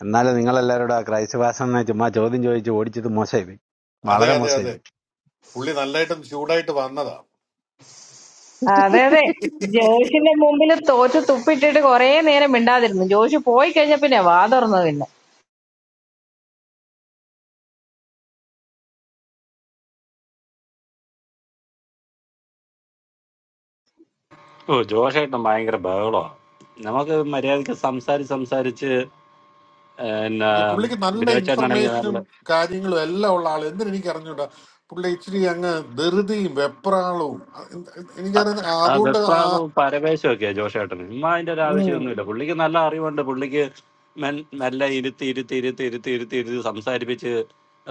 Speaker 15: എന്നാലും നിങ്ങളെല്ലാവരോടും ആ ക്രൈസ്തവാസം എന്ന് ചുമ്മാ ചോദ്യം ചോദിച്ച് ഓടിച്ചത് മോശമായി
Speaker 11: അതെ
Speaker 15: വളരെ
Speaker 11: അതെ അതെ
Speaker 15: മോശമായി
Speaker 11: പുള്ളി നല്ലതായിട്ടും ചൂടായിട്ട് വന്നതാ
Speaker 13: ആ, അതെ അതെ ജോഷിന്റെ മുമ്പിൽ തോറ്റ് തുപ്പിട്ടിട്ട് കുറേ നേരം മിണ്ടാതിരുന്നു ജോഷ് പോയി കഴിഞ്ഞ പിന്നെ വാ തുറന്നു പിന്നെ
Speaker 7: ഓ ജോഷേട്ടൻ ഭയങ്കര ബഹളോ നമുക്ക് മര്യാദക്ക് സംസാരിച്ച് സംസാരിച്ച് പിന്നെ
Speaker 11: ഈ പുള്ളിക്ക് നല്ല
Speaker 7: ബിനോച്ചേട്ടനാണെങ്കിൽ
Speaker 11: ഇൻഫർമേഷനും
Speaker 7: നല്ല
Speaker 11: കാര്യങ്ങളും എല്ലാം ഉള്ള ആൾ എന്തിനു എനിക്ക് അറിഞ്ഞൂടാ പുള്ളി ഇച്ചിരി അങ്ങ് ധൃതിയും വെപ്രാളവും അ- എന്ത്- എന്ത് എനിക്കറിയാം
Speaker 7: ആ
Speaker 11: അതുകൊണ്ട് ആ-
Speaker 7: വെപ്രാണവും പരവേശവും ഒക്കെയാ ജോഷേട്ടന് ഉമ്മാ അതിന്റെ ഒരു
Speaker 11: ഉം.
Speaker 7: ആവശ്യമൊന്നുമില്ല പുള്ളിക്ക് നല്ല അറിവുണ്ട് പുള്ളിക്ക് മെൽ- മെല്ലെ ഇരുത്തി ഇരുത്തി ഇരുത്തി ഇരുത്തി ഇരുത്തി ഇരുത്തി സംസാരിപ്പിച്ച്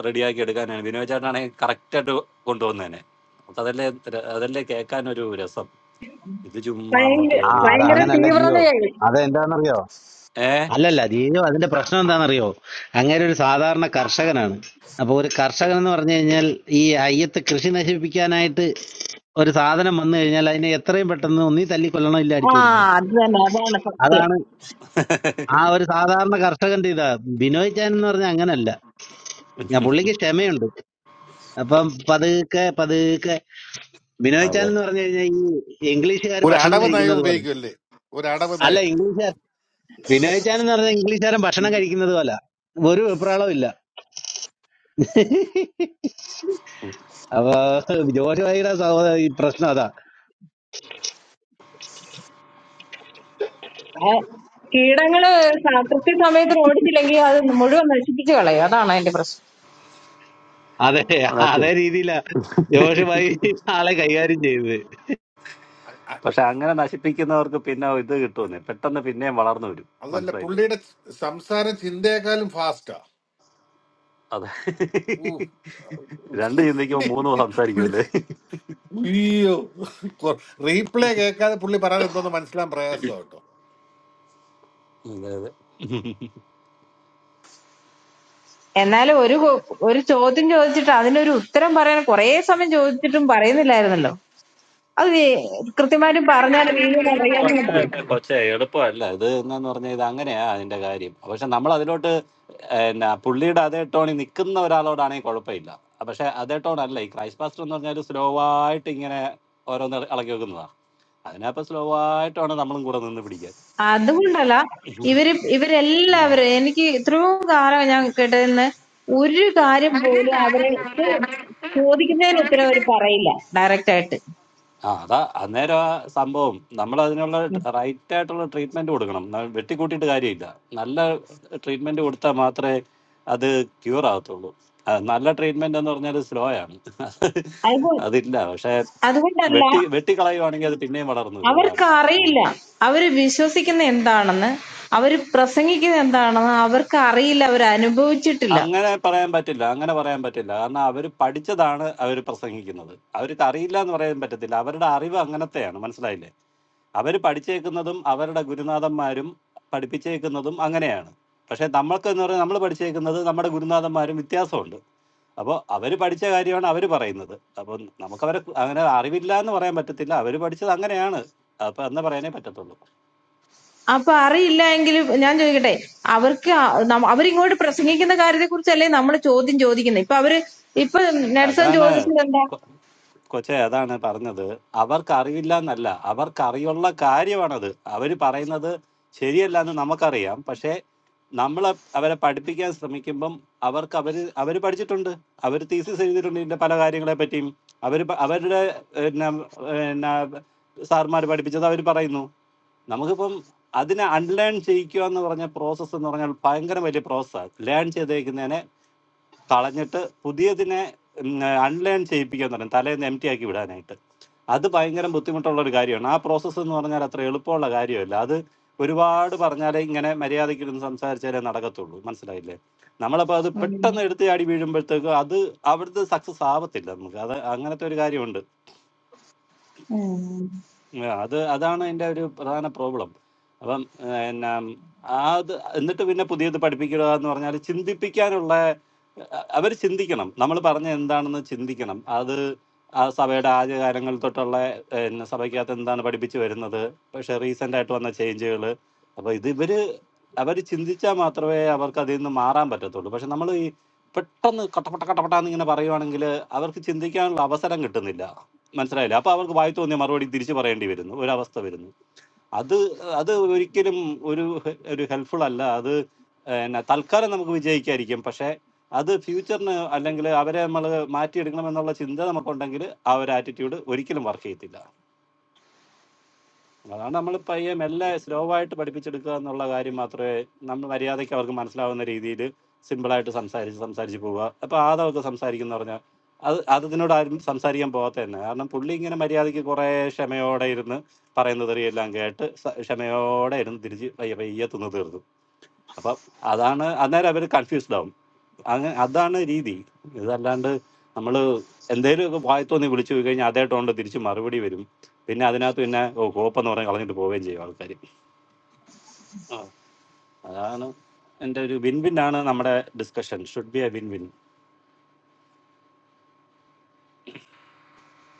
Speaker 7: റെഡിയാക്കി എടുക്കാനാണ് ബിനോച്ചേട്ടനാണെങ്കിൽ കറക്റ്റായിട്ട് കൊണ്ടുവന്നേനെ നമുക്ക് അതല്ലേ അതല്ലേ കേൾക്കാൻ ഒരു രസം ഇത് ചുമ്മാ അങ്ങോട്ട്
Speaker 13: ഭയങ്കര
Speaker 15: ആ
Speaker 7: കയറി
Speaker 15: അത്
Speaker 13: ഭയങ്കര
Speaker 15: അങ്ങനല്ല
Speaker 7: കണ്ട
Speaker 15: ജിയോ
Speaker 13: തീവ്രതയായി
Speaker 15: അത് എന്താണെന്നറിയോ അല്ലല്ല ജിയോ അതിന്റെ പ്രശ്നം എന്താണെന്നറിയോ അങ്ങനെ ഒരു സാധാരണ കർഷകനാണ് അപ്പൊ ഒരു കർഷകൻ എന്ന് പറഞ്ഞു കഴിഞ്ഞാൽ ഈ അയ്യത്ത് കൃഷി നശിപ്പിക്കാനായിട്ട് ഒരു സാധനം വന്നു കഴിഞ്ഞാൽ അതിനെ എത്രയും പെട്ടെന്ന് ഒന്നീ തല്ലിക്കൊല്ലണം ഇല്ല
Speaker 13: ആ
Speaker 15: അടിച്ചോടിക്കണം
Speaker 13: അത് തന്നെ അതാണ് സത്യം
Speaker 15: അതാണ് ആ ഒരു സാധാരണ കർഷകന്റെ ഇതാ ബിനോയ് ചാൻ എന്ന് പറഞ്ഞാൽ അങ്ങനല്ല ഞാൻ പുള്ളിക്ക് ക്ഷമയുണ്ട് അപ്പം പതുക്കെ പതുക്കെ ബിനോയ് ചാൻ
Speaker 7: ഏ
Speaker 15: എന്ന് പറഞ്ഞു കഴിഞ്ഞാൽ ഈ ഇംഗ്ലീഷുകാർ
Speaker 11: ഒരു
Speaker 15: ഭക്ഷണം
Speaker 11: അടവ് നയം
Speaker 15: കഴിക്കുന്നത് പോലെ
Speaker 11: ഉപയോഗിക്കുമല്ലേ ഒരു അടവ്
Speaker 15: അല്ല
Speaker 11: നയം
Speaker 15: ഇംഗ്ലീഷുകാർ ബിനോയ് ചാൻ എന്ന് പറഞ്ഞാൽ ഇംഗ്ലീഷുകാരൻ ഭക്ഷണം കഴിക്കുന്നത് പോലെ ഒരു വെപ്രാളവും ഇല്ല അപ്പൊ ജോഷ് ഭായിയുടെ സഹോദര ഈ പ്രശ്നം അതാ
Speaker 13: ഏ, കീടങ്ങള് സ- കൃത്യസമയത്ത് ഓടിച്ചില്ലെങ്കിൽ അത് മുഴുവൻ നശിപ്പിച്ച് കളയും അതാണ് അതിന്റെ പ്രശ്നം
Speaker 15: അതെ അതേ
Speaker 7: അതൊക്കെയാണ്.
Speaker 15: രീതിയിലാ ജോഷ് ഭായി ആളെ കൈകാര്യം ചെയ്തത്
Speaker 11: അ- അ-
Speaker 7: പക്ഷെ അങ്ങനെ നശിപ്പിക്കുന്നവർക്ക് പിന്നെ ഇത് കിട്ടുമെന്നേ പെട്ടെന്ന് പിന്നെയും വളർന്നു വരും
Speaker 11: അതല്ല
Speaker 7: മനസ്സിലായില്ലേ
Speaker 11: പുള്ളിയുടെ സംസാരം ചിന്തയെക്കാളും ഫാസ്റ്റാ
Speaker 7: അതെ
Speaker 11: ഓ
Speaker 7: രണ്ട് ചിന്തിക്കുമ്പോ മൂന്ന് സംസാരിക്കും
Speaker 11: പുള്ളി
Speaker 7: അല്ലേ
Speaker 11: അയ്യോ റീപ്ലേ കേൾക്കാതെ പുള്ളി പറയാൻ എന്തോന്ന് മനസ്സിലാൻ പ്രയാസം കേട്ടോ
Speaker 7: അതെ അതെ
Speaker 13: എന്നാലും ഒരു കോ- ഒരു ചോദ്യം ചോദിച്ചിട്ട് അതിനൊരു ഉത്തരം പറയാൻ കുറേ സമയം ചോദിച്ചിട്ടും പറയുന്നില്ലായിരുന്നല്ലോ അത് വി- കൃത്യമായിട്ട് പറഞ്ഞാൽ വീഴുമെന്ന് അറിയാന്നുണ്ടല്ലോ
Speaker 7: പറഞ്ഞ കൊച്ചേ എളുപ്പമല്ല ഇത് എന്നു പറഞ്ഞാൽ ഇത് അങ്ങനെയാ അതിന്റെ കാര്യം പക്ഷെ നമ്മൾ അതിലോട്ട് എന്നാ പുള്ളിയുടെ അതേ ടോണിൽ നിൽക്കുന്ന ഒരാളോടാണെങ്കിൽ കുഴപ്പമില്ല പക്ഷെ അതേ ടോണല്ല ഈ ക്രൈസ്റ്റ് പാസ്റ്റർ എന്ന് പറഞ്ഞാൽ സ്ലോ ആയിട്ട് ഇങ്ങനെ ഓരോന്ന് ഇളക്കി വെക്കുന്നതാ അതിനപ്പോ സ്ലോ ആയിട്ടാണ് നമ്മളും കൂടെ നിന്ന് പിടിക്കാൻ
Speaker 13: അതുകൊണ്ടല്ല ഇവര്
Speaker 7: ഉം.
Speaker 13: ഇവരെല്ലാവരും എനിക്ക് ഇത്രയും കാലം ഞാൻ കേട്ടതെന്ന് ഒരു കാര്യം
Speaker 7: ഒരു
Speaker 13: പോലും
Speaker 7: കാലം പോലെ
Speaker 13: അവർക്ക്
Speaker 7: അവർക്ക്
Speaker 13: ചോദിക്കുന്നതിന് ഉത്തരം അവർ
Speaker 7: ചോദിക്കുന്ന
Speaker 13: പറയില്ല ഡയറക്റ്റ് ആയിട്ട്
Speaker 7: ആ അതാ അന്നേരം ആ സംഭവം നമ്മൾ അതിനുള്ള റൈറ്റ് ആയിട്ടുള്ള ട്രീറ്റ്മെന്റ് കൊടുക്കണം ന- വെട്ടിക്കൂട്ടിയിട്ട് കാര്യമില്ല നല്ല ട്രീറ്റ്മെന്റ് കൊടുത്താൽ മാത്രമേ അത് ക്യൂർ ആകത്തുള്ളൂ ആ, നല്ല ട്രീറ്റ്മെന്റ് എന്ന് പറഞ്ഞാൽ സ്ലോ ആണ്
Speaker 13: അതുകൊ-
Speaker 7: അതില്ല പക്ഷെ
Speaker 13: അതുകൊണ്ടല്ല
Speaker 7: വെട്ടി വെട്ടിക്കളയുവാണെങ്കിൽ അത് പിന്നെയും വളർന്നു വരും
Speaker 13: അവർക്ക്
Speaker 7: അതാണ്
Speaker 13: അറിയില്ല
Speaker 7: ഉം.
Speaker 13: അവര് വിശ്വസിക്കുന്ന എന്താണെന്ന് അവര് പ്രസംഗിക്കുന്ന എന്താണെന്ന് അവർക്ക് അറിയില്ല അവർ അനുഭവിച്ചിട്ടില്ല
Speaker 7: അങ്ങനെ പറയാൻ പറ്റില്ല അങ്ങനെ പറയാൻ പറ്റില്ല കാരണം അവർ പഠിച്ചതാണ് അവർ പ്രസംഗിക്കുന്നത് അവർക്ക് അറിയില്ല എന്ന് പറയാൻ പറ്റത്തില്ല അവരുടെ അറിവ് അങ്ങനത്തെയാണ് മനസ്സിലായില്ലേ അവർ പഠിച്ചേക്കുന്നതും അവരുടെ ഗുരുനാഥന്മാരും പഠിപ്പിച്ചേക്കുന്നതും അങ്ങനെയാണ് പക്ഷെ നമ്മൾക്ക് എന്ന് പറഞ്ഞാൽ നമ്മൾ പഠിച്ചേക്കുന്നത് നമ്മുടെ ഗുരുനാഥന്മാരും വ്യത്യാസമുണ്ട് അപ്പോൾ അവർ പഠിച്ച കാര്യമാണ് അവർ പറയുന്നത് അപ്പോൾ നമുക്കവരെ അങ്ങനെ അറിവില്ല എന്ന് പറയാൻ പറ്റത്തില്ല അവർ പഠിച്ചത് അങ്ങനെയാണ് അപ്പൊ എന്നാ പറയാനേ പറ്റത്തുള്ളൂ
Speaker 13: അപ്പൊ അറിയില്ല എങ്കിലും ഞാൻ ചോദിക്കട്ടെ അവർക്ക് ആ- നമ്മ- അവരിങ്ങോട്ട് പ്രസംഗിക്കുന്ന കാര്യത്തെ കുറിച്ചല്ലേ നമ്മൾ ചോദ്യം ചോദിക്കുന്നത് ഇപ്പൊ അവര് ഇപ്പൊ നെൽസൺ
Speaker 7: അതാണ്
Speaker 13: ചോദിച്ചത്
Speaker 7: കൊ-
Speaker 13: എന്താ
Speaker 7: കൊച്ചെ അതാണ് പറഞ്ഞത് അവർക്ക് അറിവില്ല എന്നല്ല അവർക്ക് അറിയുള്ള കാര്യമാണത് അവർ പറയുന്നത് ശരിയല്ല എന്ന് നമുക്കറിയാം പക്ഷേ നമ്മൾ അവരെ പഠിപ്പിക്കാൻ ശ്രമിക്കുമ്പം അവർക്ക് അവർ അവർ പഠിച്ചിട്ടുണ്ട് അവർ തീസിസ് എഴുതിയിട്ടുണ്ട് ഇതിന്റെ പല കാര്യങ്ങളെ പറ്റിയും അവർ അവരുടെ പിന്നെ പിന്നെ സാർമാർ പഠിപ്പിച്ചത് അവർ പറയുന്നു നമുക്കിപ്പം അതിനെ അൺലേൺ ചെയ്യിക്കുക എന്ന് പറഞ്ഞ പ്രോസസ്സ് എന്ന് പറഞ്ഞാൽ ഭയങ്കര വലിയ പ്രോസസ്സാണ് ലേൺ ചെയ്തേക്കുന്നതിനെ കളഞ്ഞിട്ട് പുതിയതിനെ അൺലേൺ ചെയ്യിപ്പിക്കുക എന്ന് പറയും തലേന്ന് എം ടി ആക്കി വിടാനായിട്ട് അത് ഭയങ്കര ബുദ്ധിമുട്ടുള്ള ഒരു കാര്യമാണ് ആ പ്രോസസ്സ് എന്ന് പറഞ്ഞാൽ അത്ര എളുപ്പമുള്ള കാര്യമല്ല അത് ഒരുപാട് പറഞ്ഞാലേ ഇങ്ങനെ മര്യാദയ്ക്കിരുന്ന് സംസാരിച്ചാലേ നടക്കത്തുള്ളൂ മനസ്സിലായില്ലേ നമ്മളപ്പോൾ അത് പെട്ടെന്ന് എടുത്ത് ചാടി വീഴുമ്പോഴത്തേക്ക് അത് അവിടുത്തെ സക്സസ് ആവത്തില്ല നമുക്ക് അത് അങ്ങനത്തെ ഒരു കാര്യമുണ്ട് ഉം, അത് അതാണ് എൻ്റെ ഒരു പ്രധാന പ്രോബ്ലം അപ്പം എന്നാ അത് എന്നിട്ട് പിന്നെ പുതിയത് പഠിപ്പിക്കുക എന്ന് പറഞ്ഞാൽ ചിന്തിപ്പിക്കാനുള്ള അവർ ചിന്തിക്കണം നമ്മൾ പറഞ്ഞ എന്താണെന്ന് ചിന്തിക്കണം അത് ആ സഭയുടെ ആദ്യകാലങ്ങൾ തൊട്ടുള്ള പിന്നെ സഭയ്ക്കകത്ത് എന്താണ് പഠിപ്പിച്ചു വരുന്നത് പക്ഷെ റീസെന്റ് ആയിട്ട് വന്ന ചേഞ്ചുകൾ അപ്പൊ ഇത് ഇവര് അവർ ചിന്തിച്ചാൽ മാത്രമേ അവർക്ക് അതിൽ നിന്ന് മാറാൻ പറ്റത്തുള്ളൂ പക്ഷെ നമ്മൾ ഈ പെട്ടെന്ന് കട്ടപ്പെട്ട കട്ടപ്പെട്ടാന്ന് ഇങ്ങനെ പറയുവാണെങ്കിൽ അവർക്ക് ചിന്തിക്കാനുള്ള അവസരം കിട്ടുന്നില്ല മനസ്സിലായില്ല അപ്പൊ അവർക്ക് വായി തോന്നിയ മറുപടി തിരിച്ചു പറയേണ്ടി വരുന്നു ഒരവസ്ഥ വരുന്നു അത് അത് ഒരിക്കലും ഒരു ഒരു ഹെൽപ്ഫുൾ അല്ല അത് എന്നാ തൽക്കാലം നമുക്ക് വിജയിക്കായിരിക്കും പക്ഷെ അത് ഫ്യൂച്ചറിന് അല്ലെങ്കിൽ അവരെ നമ്മൾ മാറ്റിയെടുക്കണം എന്നുള്ള ചിന്ത നമുക്കുണ്ടെങ്കിൽ ആ ഒരു ആറ്റിറ്റ്യൂഡ് ഒരിക്കലും വർക്ക് ചെയ്യത്തില്ല അതാണ് നമ്മൾ പയ്യെ മെല്ലെ സ്ലോ ആയിട്ട് പഠിപ്പിച്ചെടുക്കുക എന്നുള്ള കാര്യം മാത്രമേ നമ്മൾ മര്യാദയ്ക്ക് അവർക്ക് മനസ്സിലാവുന്ന രീതിയിൽ സിമ്പിളായിട്ട് സംസാരിച്ച് സംസാരിച്ച് പോവുക അപ്പോൾ ആദവൊക്കെ സംസാരിക്കുന്ന പറഞ്ഞാൽ അത് അത് ഇതിനോട് ആരും സംസാരിക്കാൻ പോകാത്ത തന്നെ കാരണം പുള്ളി ഇങ്ങനെ മര്യാദയ്ക്ക് കുറേ ക്ഷമയോടെ ഇരുന്ന് പറയുന്ന തെറിയെല്ലാം കേട്ട് സ- ക്ഷമയോടെ ഇരുന്ന് തിരിച്ച് പയ്യെ പയ്യെ തിന്ന് തീർന്നു അപ്പം അതാണ് അന്നേരം അവർ കൺഫ്യൂസ്ഡ് ആവും അങ്ങനെ അതാണ് രീതി ഇതല്ലാണ്ട് നമ്മൾ എന്തെങ്കിലുമൊക്കെ വായി തോന്നി വിളിച്ചു പോയി കഴിഞ്ഞാൽ അതേ ടോണിൽ തിരിച്ച് മറുപടി വരും പിന്നെ അതിനകത്ത് പിന്നെ ഓ കോപ്പെന്ന് പറഞ്ഞ് കളഞ്ഞിട്ട് പോവുകയും ചെയ്യും ആൾക്കാർ ആ, അതാണ് എൻ്റെ ഒരു വിൻ വിൻ ആണ് നമ്മുടെ discussion should be a win win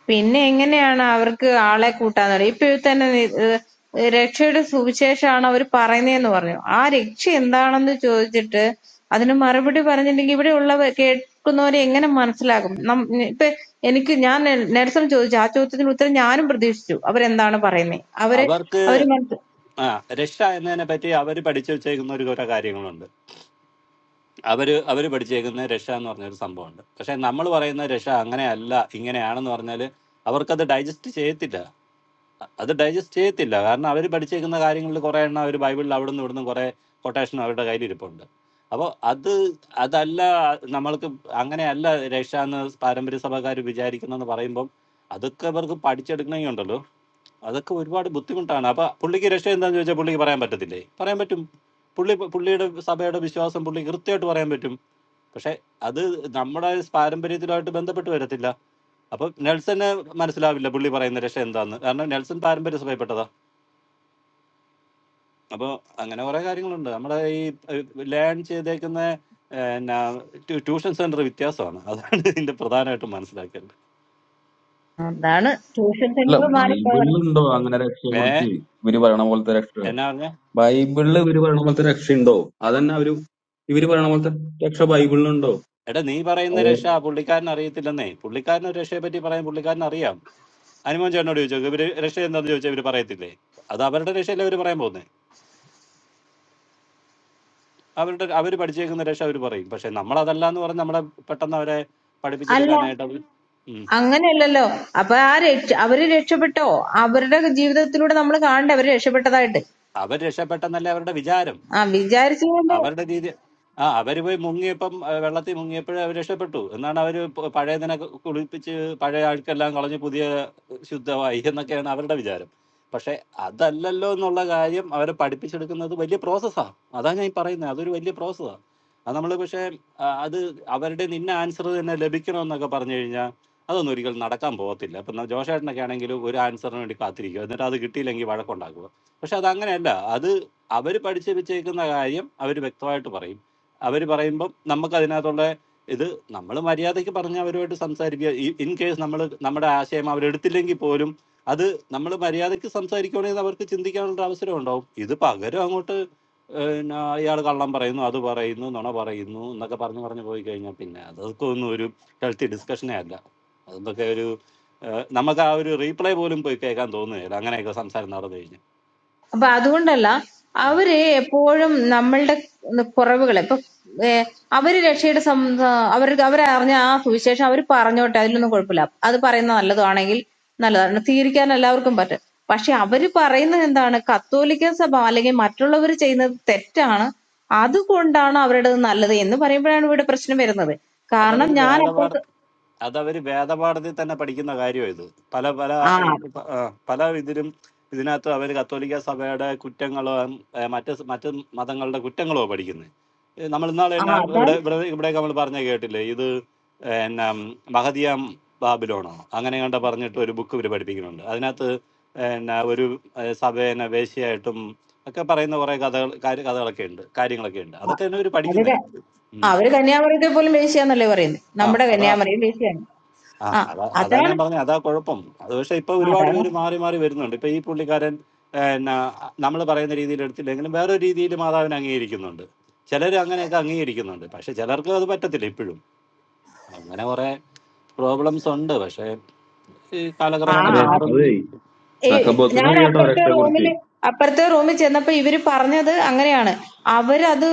Speaker 13: പിന്നെ എങ്ങനെയാണ് അവർക്ക് ആളെ കൂട്ടാൻ തുടങ്ങി. ഇപ്പൊ ഇതിൽ തന്നെ ഏഹ് രക്ഷയുടെ സുവിശേഷമാണ് അവർ പറയുന്നതെന്ന് പറഞ്ഞു. ആ രക്ഷ എന്താണെന്ന് ചോദിച്ചിട്ട് അതിന് മറുപടി പറഞ്ഞില്ലെങ്കിൽ ഇവിടെയുള്ളവർ കേൾക്കുന്നവരെ എങ്ങനെ മനസ്സിലാകും? നം- ഇപ്പൊ എനിക്ക് ഞാൻ നെ- നെൽസൺ ചോദിച്ചു ആ ചോദ്യത്തിന് ഉത്തരം ഞാനും പ്രതീക്ഷിച്ചു അവരെന്താണ് പറയുന്നത് അവര്
Speaker 7: അവർക്ക്
Speaker 13: അവര് മനസ്സി-
Speaker 7: ആ രക്ഷ എന്നതിനെ പറ്റി അവർ പഠിച്ചു വെച്ചേക്കുന്ന ഒരു കുറെ കാര്യങ്ങളുണ്ട് അവര് അവർ പഠിച്ചേക്കുന്ന രക്ഷ എന്ന് പറഞ്ഞൊരു സംഭവമുണ്ട് പക്ഷെ നമ്മൾ പറയുന്ന രക്ഷ അങ്ങനെയല്ല ഇങ്ങനെയാണെന്ന് പറഞ്ഞാൽ അവർക്കത് ഡൈജസ്റ്റ് ചെയ്യത്തില്ല അത് ഡൈജസ്റ്റ് ചെയ്യത്തില്ല കാരണം അവർ പഠിച്ചേക്കുന്ന കാര്യങ്ങളിൽ കുറേ എണ്ണം അവർ ബൈബിളിൽ അവിടെ നിന്ന് ഇവിടുന്ന് കുറേ കൊട്ടേഷൻ അവരുടെ കയ്യിൽ ഇരിപ്പുണ്ട് അപ്പോൾ അത് അതല്ല നമ്മൾക്ക് അങ്ങനെയല്ല രക്ഷ എന്ന് പാരമ്പര്യ സഭക്കാർ വിചാരിക്കുന്നെന്ന് പറയുമ്പം അതൊക്കെ അവർക്ക് പഠിച്ചെടുക്കണമെങ്കിൽ ഉണ്ടല്ലോ അതൊക്കെ ഒരുപാട് ബുദ്ധിമുട്ടാണ് അപ്പോൾ പുള്ളിക്ക് രക്ഷ എന്താണെന്ന് ചോദിച്ചാൽ പുള്ളിക്ക് പറയാൻ പറ്റത്തില്ലേ പറയാൻ പറ്റും പുള്ളി പുള്ളിയുടെ സഭയുടെ വിശ്വാസം പുള്ളി കൃത്യമായിട്ട് പറയാൻ പറ്റും പക്ഷെ അത് നമ്മുടെ പാരമ്പര്യത്തിലുമായിട്ട് ബന്ധപ്പെട്ട് വരത്തില്ല അപ്പൊ നെൽസന് മനസ്സിലാവില്ല പുള്ളി പറയുന്ന രക്ഷ എന്താന്ന് കാരണം നെൽസൺ പാരമ്പര്യ സഭയപ്പെട്ടതാ അപ്പൊ അങ്ങനെ കുറെ കാര്യങ്ങളുണ്ട് നമ്മുടെ ഈ ലേൺ ചെയ്തേക്കുന്ന എന്നാ ട്യൂ- ട്യൂഷൻ സെന്റർ വ്യത്യാസമാണ് അതാണ് ഇതിന്റെ പ്രധാനമായിട്ടും മനസ്സിലാക്കേണ്ടത്
Speaker 13: അതാണ് ട്യൂഷൻ
Speaker 12: അല്ല
Speaker 13: സെന്റർ മാറിപ്പോയത്
Speaker 12: ബൈബിളിലുണ്ടോ അങ്ങനെ രക്ഷയെ
Speaker 7: ഏ
Speaker 12: കുറിച്ച് ഇവര് പറയണ പോലത്തെ രക്ഷ
Speaker 7: എന്നാ പറഞ്ഞ
Speaker 12: ബൈബിളിൽ ഇവര് പറയണ പോലത്തെ രക്ഷ ഉണ്ടോ അതന്നെ അവര് ഇവര് പറയണ പോലത്തെ രക്ഷ ബൈബിളിലുണ്ടോ
Speaker 7: എടാ നീ പറയുന്ന
Speaker 12: അത്
Speaker 7: രക്ഷ പുള്ളിക്കാരൻ അറിയത്തില്ലെന്നേ പുള്ളിക്കാരന് ഒരു രക്ഷയെ പറ്റി പറയാൻ പുള്ളിക്കാരൻ അറിയാം അനുമോൻ ചേട്ടനോട് ചോദിച്ചോ ഇവര് രക്ഷ എന്താന്ന് ചോദിച്ചാൽ ഇവര് പറയത്തില്ലേ അത് അവരുടെ രക്ഷയല്ലേ അവര് പറയാൻ പോകുന്നത് അവരുടെ അവര് പഠിച്ചേക്കുന്ന രക്ഷ അവര് പറയും പക്ഷെ നമ്മൾ അതല്ല എന്ന് പറഞ്ഞ് നമ്മളെ പെട്ടെന്ന് അവരെ
Speaker 13: അല്ല
Speaker 7: പഠിപ്പിച്ചെടുക്കാനായിട്ട് അവർ ഉം.
Speaker 13: അങ്ങനെയല്ലല്ലോ അപ്പൊ ആ രക്ഷ അവര് രക്ഷപ്പെട്ടോ അവരുടെ ജീവിതത്തിലൂടെ നമ്മൾ കാണണ്ടേ അവര് രക്ഷപ്പെട്ടതായിട്ട്
Speaker 7: അവർ രക്ഷപ്പെട്ടെന്നല്ലേ അവരുടെ വിചാരം
Speaker 13: ആ വിചാരിച്ചതുകൊണ്ട്
Speaker 7: അവരുടെ രീതി ആ അവര് പോയി മുങ്ങിയപ്പം ആ, വെള്ളത്തിൽ മുങ്ങിയപ്പോഴേ അവർ രക്ഷപ്പെട്ടു എന്നാണ് അവര് പ- പഴയതിനെ ക- കുളിപ്പിച്ച് പഴയ ആൾക്കെല്ലാം കളഞ്ഞ് പുതിയ ശുദ്ധമായി എന്നൊക്കെയാണ് അവരുടെ വിചാരം പക്ഷെ അതല്ലല്ലോ എന്നുള്ള കാര്യം അവരെ പഠിപ്പിച്ചെടുക്കുന്നത് വലിയ പ്രോസസ്സാണ് അതാ ഞാൻ ഈ പറയുന്നത് അതൊരു വലിയ പ്രോസസ്സാണ് അത് നമ്മൾ പക്ഷേ ആ, അത് അവരുടെ നിന്ന ആൻസർ തന്നെ ലഭിക്കണമെന്നൊക്കെ പറഞ്ഞു കഴിഞ്ഞാൽ അതൊന്നും ഒരിക്കലും നടക്കാൻ പോകത്തില്ല ഇപ്പം ജോഷേട്ടനൊക്കെ ആണെങ്കിൽ ഒരു ആൻസറിന് വേണ്ടി കാത്തിരിക്കുക എന്നിട്ട് അത് കിട്ടിയില്ലെങ്കിൽ വഴക്കുണ്ടാക്കുക പക്ഷെ അത് അങ്ങനെയല്ല അത് അവർ പഠിച്ച് വെച്ചേക്കുന്ന കാര്യം അവർ വ്യക്തമായിട്ട് പറയും അവർ പറയുമ്പം നമുക്ക് അതിനകത്തുള്ള ഇത് നമ്മൾ മര്യാദയ്ക്ക് പറഞ്ഞ് അവരുമായിട്ട് സംസാരിക്കുക ഇൻ കേസ് നമ്മൾ നമ്മുടെ ആശയം അവരെടുത്തില്ലെങ്കിൽ പോലും അത് നമ്മൾ മര്യാദയ്ക്ക് സംസാരിക്കുകയാണെങ്കിൽ അവർക്ക് ചിന്തിക്കാനുള്ള അവസരം ഉണ്ടാവും ഇത് പകരം അങ്ങോട്ട് അയാൾ കള്ളം പറയുന്നു അത് പറയുന്നു നുണ പറയുന്നു എന്നൊക്കെ പറഞ്ഞു പറഞ്ഞു പോയി കഴിഞ്ഞാൽ പിന്നെ അതൊക്കെ ഒന്നും ഒരു ഹെൽത്തി ഡിസ്കഷനേ അല്ല അതൊക്കെ ഒരു ഏഹ്, നമുക്ക് ആ ഒരു റീപ്ലൈ പോലും പോയി കേൾക്കാൻ തോന്നുകയില്ല അങ്ങനെയൊക്കെ സംസാരം നടന്നു കഴിഞ്ഞാൽ
Speaker 13: അപ്പൊ അതുകൊണ്ടല്ല അവര് എപ്പോഴും നമ്മളുടെ കുറവുകളെ ഇപ്പൊ ഏ, അവര് രക്ഷയുടെ സം- അവർ അവരറിഞ്ഞ ആ സുവിശേഷം അവർ പറഞ്ഞോട്ടെ അതിലൊന്നും കുഴപ്പമില്ല അത് പറയുന്ന നല്ലതാണെങ്കിൽ നല്ലതാണ് സ്വീകരിക്കാൻ എല്ലാവർക്കും പറ്റും പക്ഷെ അവര് പറയുന്നത് എന്താണ് കത്തോലിക്ക സഭ അല്ലെങ്കിൽ മറ്റുള്ളവർ ചെയ്യുന്നത് തെറ്റാണ് അതുകൊണ്ടാണ് അവരുടെ നല്ലത് എന്ന് പറയുമ്പോഴാണ് ഇവിടെ പ്രശ്നം വരുന്നത് കാരണം
Speaker 7: അതവർ
Speaker 13: ഞാൻ
Speaker 7: വേദപാഠ
Speaker 13: അപ്പുറത്ത്
Speaker 7: അതവര് വേദപാഠത്തിൽ തന്നെ പഠിക്കുന്ന കാര്യമാണ് ഇത് പല പല
Speaker 13: ആ
Speaker 7: ഏഹ്, പ- ആ, പല ഇതിലും ഇതിനകത്ത് അവർ കത്തോലിക്ക സഭയുടെ കുറ്റങ്ങളോ ഉം, ഏഹ്, മറ്റ് സ- മറ്റ് മതങ്ങളുടെ കുറ്റങ്ങളോ പഠിക്കുന്നത് നമ്മൾ ഇന്നാൾ
Speaker 13: ആ
Speaker 7: തന്നെ
Speaker 13: അതാണ്
Speaker 7: ഇവിടെ ഇവിടെ ഇവിടെയൊക്കെ നമ്മൾ പറഞ്ഞ കേട്ടില്ലേ ഇത് എന്നാ മഹദിയാം ബാബിലോണോ അങ്ങനെ കണ്ട പറഞ്ഞിട്ട് ഒരു ബുക്ക് ഇവർ പഠിപ്പിക്കുന്നുണ്ട് അതിനകത്ത് എന്നാ ഒരു ഏഹ്, സഭേനെ വേശ്യയായിട്ടും ഒക്കെ പറയുന്ന കുറെ കഥകൾ കാര്യ- കഥകളൊക്കെ ഉണ്ട് കാര്യങ്ങളൊക്കെ ഉണ്ട്
Speaker 13: ആ,
Speaker 7: അതൊക്കെ തന്നെ ഇവർ
Speaker 13: അവരുടെ
Speaker 7: പഠിക്കുന്നേ
Speaker 13: ആ,
Speaker 7: ഉം.
Speaker 13: അവര് കന്യാമറിയത്തെ പോലും വേശ്യാന്നല്ലേ പറയുന്നത്
Speaker 7: ആ
Speaker 13: നമ്മുടെ
Speaker 7: അതാ
Speaker 13: കന്യാമറിയും വേശ്യാണ്
Speaker 7: ആ
Speaker 13: ആ
Speaker 7: അതാ അതാ ഞാൻ
Speaker 13: അതാണ്
Speaker 7: പറഞ്ഞ അതാ കുഴപ്പം അത് പക്ഷെ ഇപ്പൊ ഒരുപാട്
Speaker 13: അതാണ്
Speaker 7: പേര് മാറി മാറി വരുന്നുണ്ട് ഇപ്പൊ ഈ പുള്ളിക്കാരൻ നമ്മൾ പറയുന്ന രീതിയിൽ എടുത്തില്ലെങ്കിലും വേറൊരു രീതിയിൽ മാതാവിനെ അംഗീകരിക്കുന്നുണ്ട് ചിലർ അങ്ങനെയൊക്കെ അംഗീകരിക്കുന്നുണ്ട് പക്ഷെ ചിലർക്ക് അത് പറ്റത്തില്ല ഇപ്പോഴും അങ്ങനെ കുറെ പ്രോബ്ലംസ് ഉണ്ട് പക്ഷെ ഈ കാലക്രമേണ
Speaker 12: റെ-
Speaker 13: ആ
Speaker 7: മാറും
Speaker 12: അതേ
Speaker 13: ഈ
Speaker 12: റഹബത്തിന്
Speaker 13: ഞാൻ
Speaker 12: അറിയാട്ടോ
Speaker 13: അപ്പുറത്തെ
Speaker 12: രക്ഷയെ കുറിച്ച്
Speaker 13: റൂമില് അപ്പുറത്തെ റൂമിൽ ചെന്നപ്പോ ഇവര് പറഞ്ഞത് അങ്ങനെയാണ് അവരത്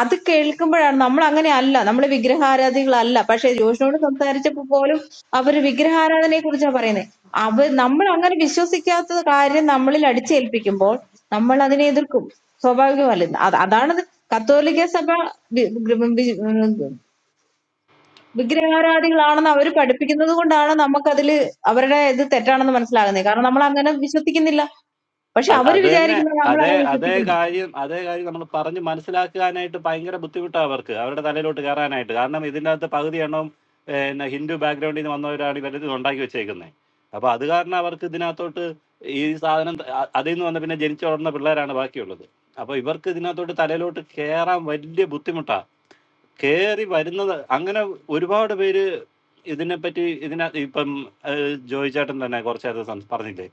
Speaker 13: അത് കേൾക്കുമ്പോഴാണ് നമ്മൾ അങ്ങനെ അല്ല നമ്മൾ വിഗ്രഹാരാധികളല്ല പക്ഷെ ജോഷിനോട് സംസാരിച്ചപ്പോ പോലും അവര് വിഗ്രഹാരാധനയെ കുറിച്ചാ പറയുന്നത് അവ നമ്മൾ അങ്ങനെ വിശ്വസിക്കാത്ത കാര്യം നമ്മളിൽ അടിച്ചേൽപ്പിക്കുമ്പോൾ നമ്മൾ അതിനെ എതിർക്കും സ്വാഭാവികമല്ല അത് അതാണ് ഇത്. കത്തോലിക്ക സഭ വി- വി- വി- വിഗ്രഹാരാധികളാണെന്ന് അവര് പഠിപ്പിക്കുന്നത് കൊണ്ടാണ് നമുക്കതില് അവരുടെ ഇത് തെറ്റാണെന്ന് മനസ്സിലാകുന്നത് കാരണം നമ്മൾ അങ്ങനെ വിശ്വസിക്കുന്നില്ല പക്ഷെ
Speaker 7: അ-
Speaker 13: അവര്
Speaker 7: അത് തന്നെ
Speaker 13: വിചാരിക്കുന്നത് നമ്മൾ
Speaker 7: അതേ
Speaker 13: അങ്ങനെ
Speaker 7: അതേ
Speaker 13: വിശ്വസിക്കുന്നു
Speaker 7: കാര്യം അതേ കാര്യം നമ്മൾ പറഞ്ഞ് മനസ്സിലാക്കാനായിട്ട് ഭയങ്കര ബുദ്ധിമുട്ടാണ് അവർക്ക് അവരുടെ തലയിലോട്ട് കയറാനായിട്ട് കാരണം ഇതിൻ്റെ അകത്ത് പകുതി എണ്ണവും പിന്നെ ഹിന്ദു ബാക്ക്ഗ്രൗണ്ടിൽ നിന്ന് വന്നവരാണ് ഇവരിത് ഉണ്ടാക്കി വെച്ചേക്കുന്നത് അപ്പോൾ അത് കാരണം അവർക്ക് ഇതിനകത്തോട്ട് ഈ സാധനം ത- അ- അതിൽ നിന്ന് വന്ന പിന്നെ ജനിച്ചു വളർന്ന പിള്ളേരാണ് ബാക്കിയുള്ളത് അപ്പോൾ ഇവർക്ക് ഇതിനകത്തോട്ട് തലയിലോട്ട് കയറാൻ വലിയ ബുദ്ധിമുട്ടാണ് കയറി വരുന്നത് അങ്ങനെ ഒരുപാട് പേര് ഇതിനെപ്പറ്റി ഇതിനകത്ത് ഇപ്പം ജോയിച്ചേട്ടൻ തന്നെ കുറച്ചേരത്തെ സംസ് പറഞ്ഞില്ലേ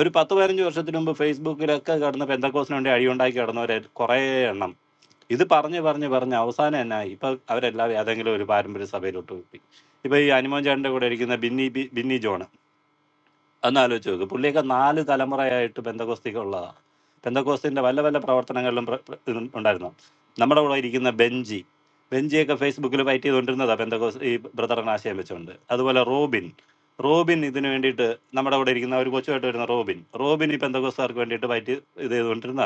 Speaker 7: ഒരു പത്ത് പതിനഞ്ച് വർഷത്തിന് മുമ്പ് ഫേസ്ബുക്കിലൊക്കെ കിടന്ന് പെന്തക്കോസിന് വേണ്ടി അഴിയുണ്ടാക്കി കിടന്നവരെ കുറേ എണ്ണം ഇത് പറഞ്ഞ് പറഞ്ഞ് പറഞ്ഞ് അവസാനം എന്നായി ഇപ്പൊ അവരെല്ലാവരും ഏതെങ്കിലും ഒരു പാരമ്പര്യ സഭയിലോട്ട് പോയി ഇപ്പൊ ഈ അനുമോൻ ചേട്ടന്റെ കൂടെ ഇരിക്കുന്ന ബിന്നി ബി- ബിന്നി ജോൺ ഒന്ന് ആലോചിച്ച് നോക്ക് പുള്ളിയൊക്കെ നാല് തലമുറയായിട്ട് ബന്ധകോസ്തിക്ക് ഉള്ളതാ ബന്ധകോസ്തിന്റെ വല്ല വല്ല പ്രവർത്തനങ്ങളിലും പ്ര- പ്ര- ഇതും ഉണ്ടായിരുന്നു നമ്മുടെ കൂടെ ഇരിക്കുന്ന ബെഞ്ചി ബെഞ്ചിയൊക്കെ ഫേസ്ബുക്കിൽ ഫൈറ്റ് ചെയ്തുകൊണ്ടിരുന്നതാ ബന്ധകോസ് ഈ ബ്രദറിന് ആശയം വെച്ചുകൊണ്ട് അതുപോലെ റോബിൻ റോബിൻ ഇതിനു വേണ്ടിയിട്ട് നമ്മുടെ കൂടെ ഇരിക്കുന്ന ഒരു കൊച്ചുമായിട്ട് വരുന്ന റോബിൻ റോബിൻ ഈ ബന്ധകോസ്താർക്ക് വേണ്ടിയിട്ട് ഫൈറ്റ് ഇത് ചെയ്തുകൊണ്ടിരുന്ന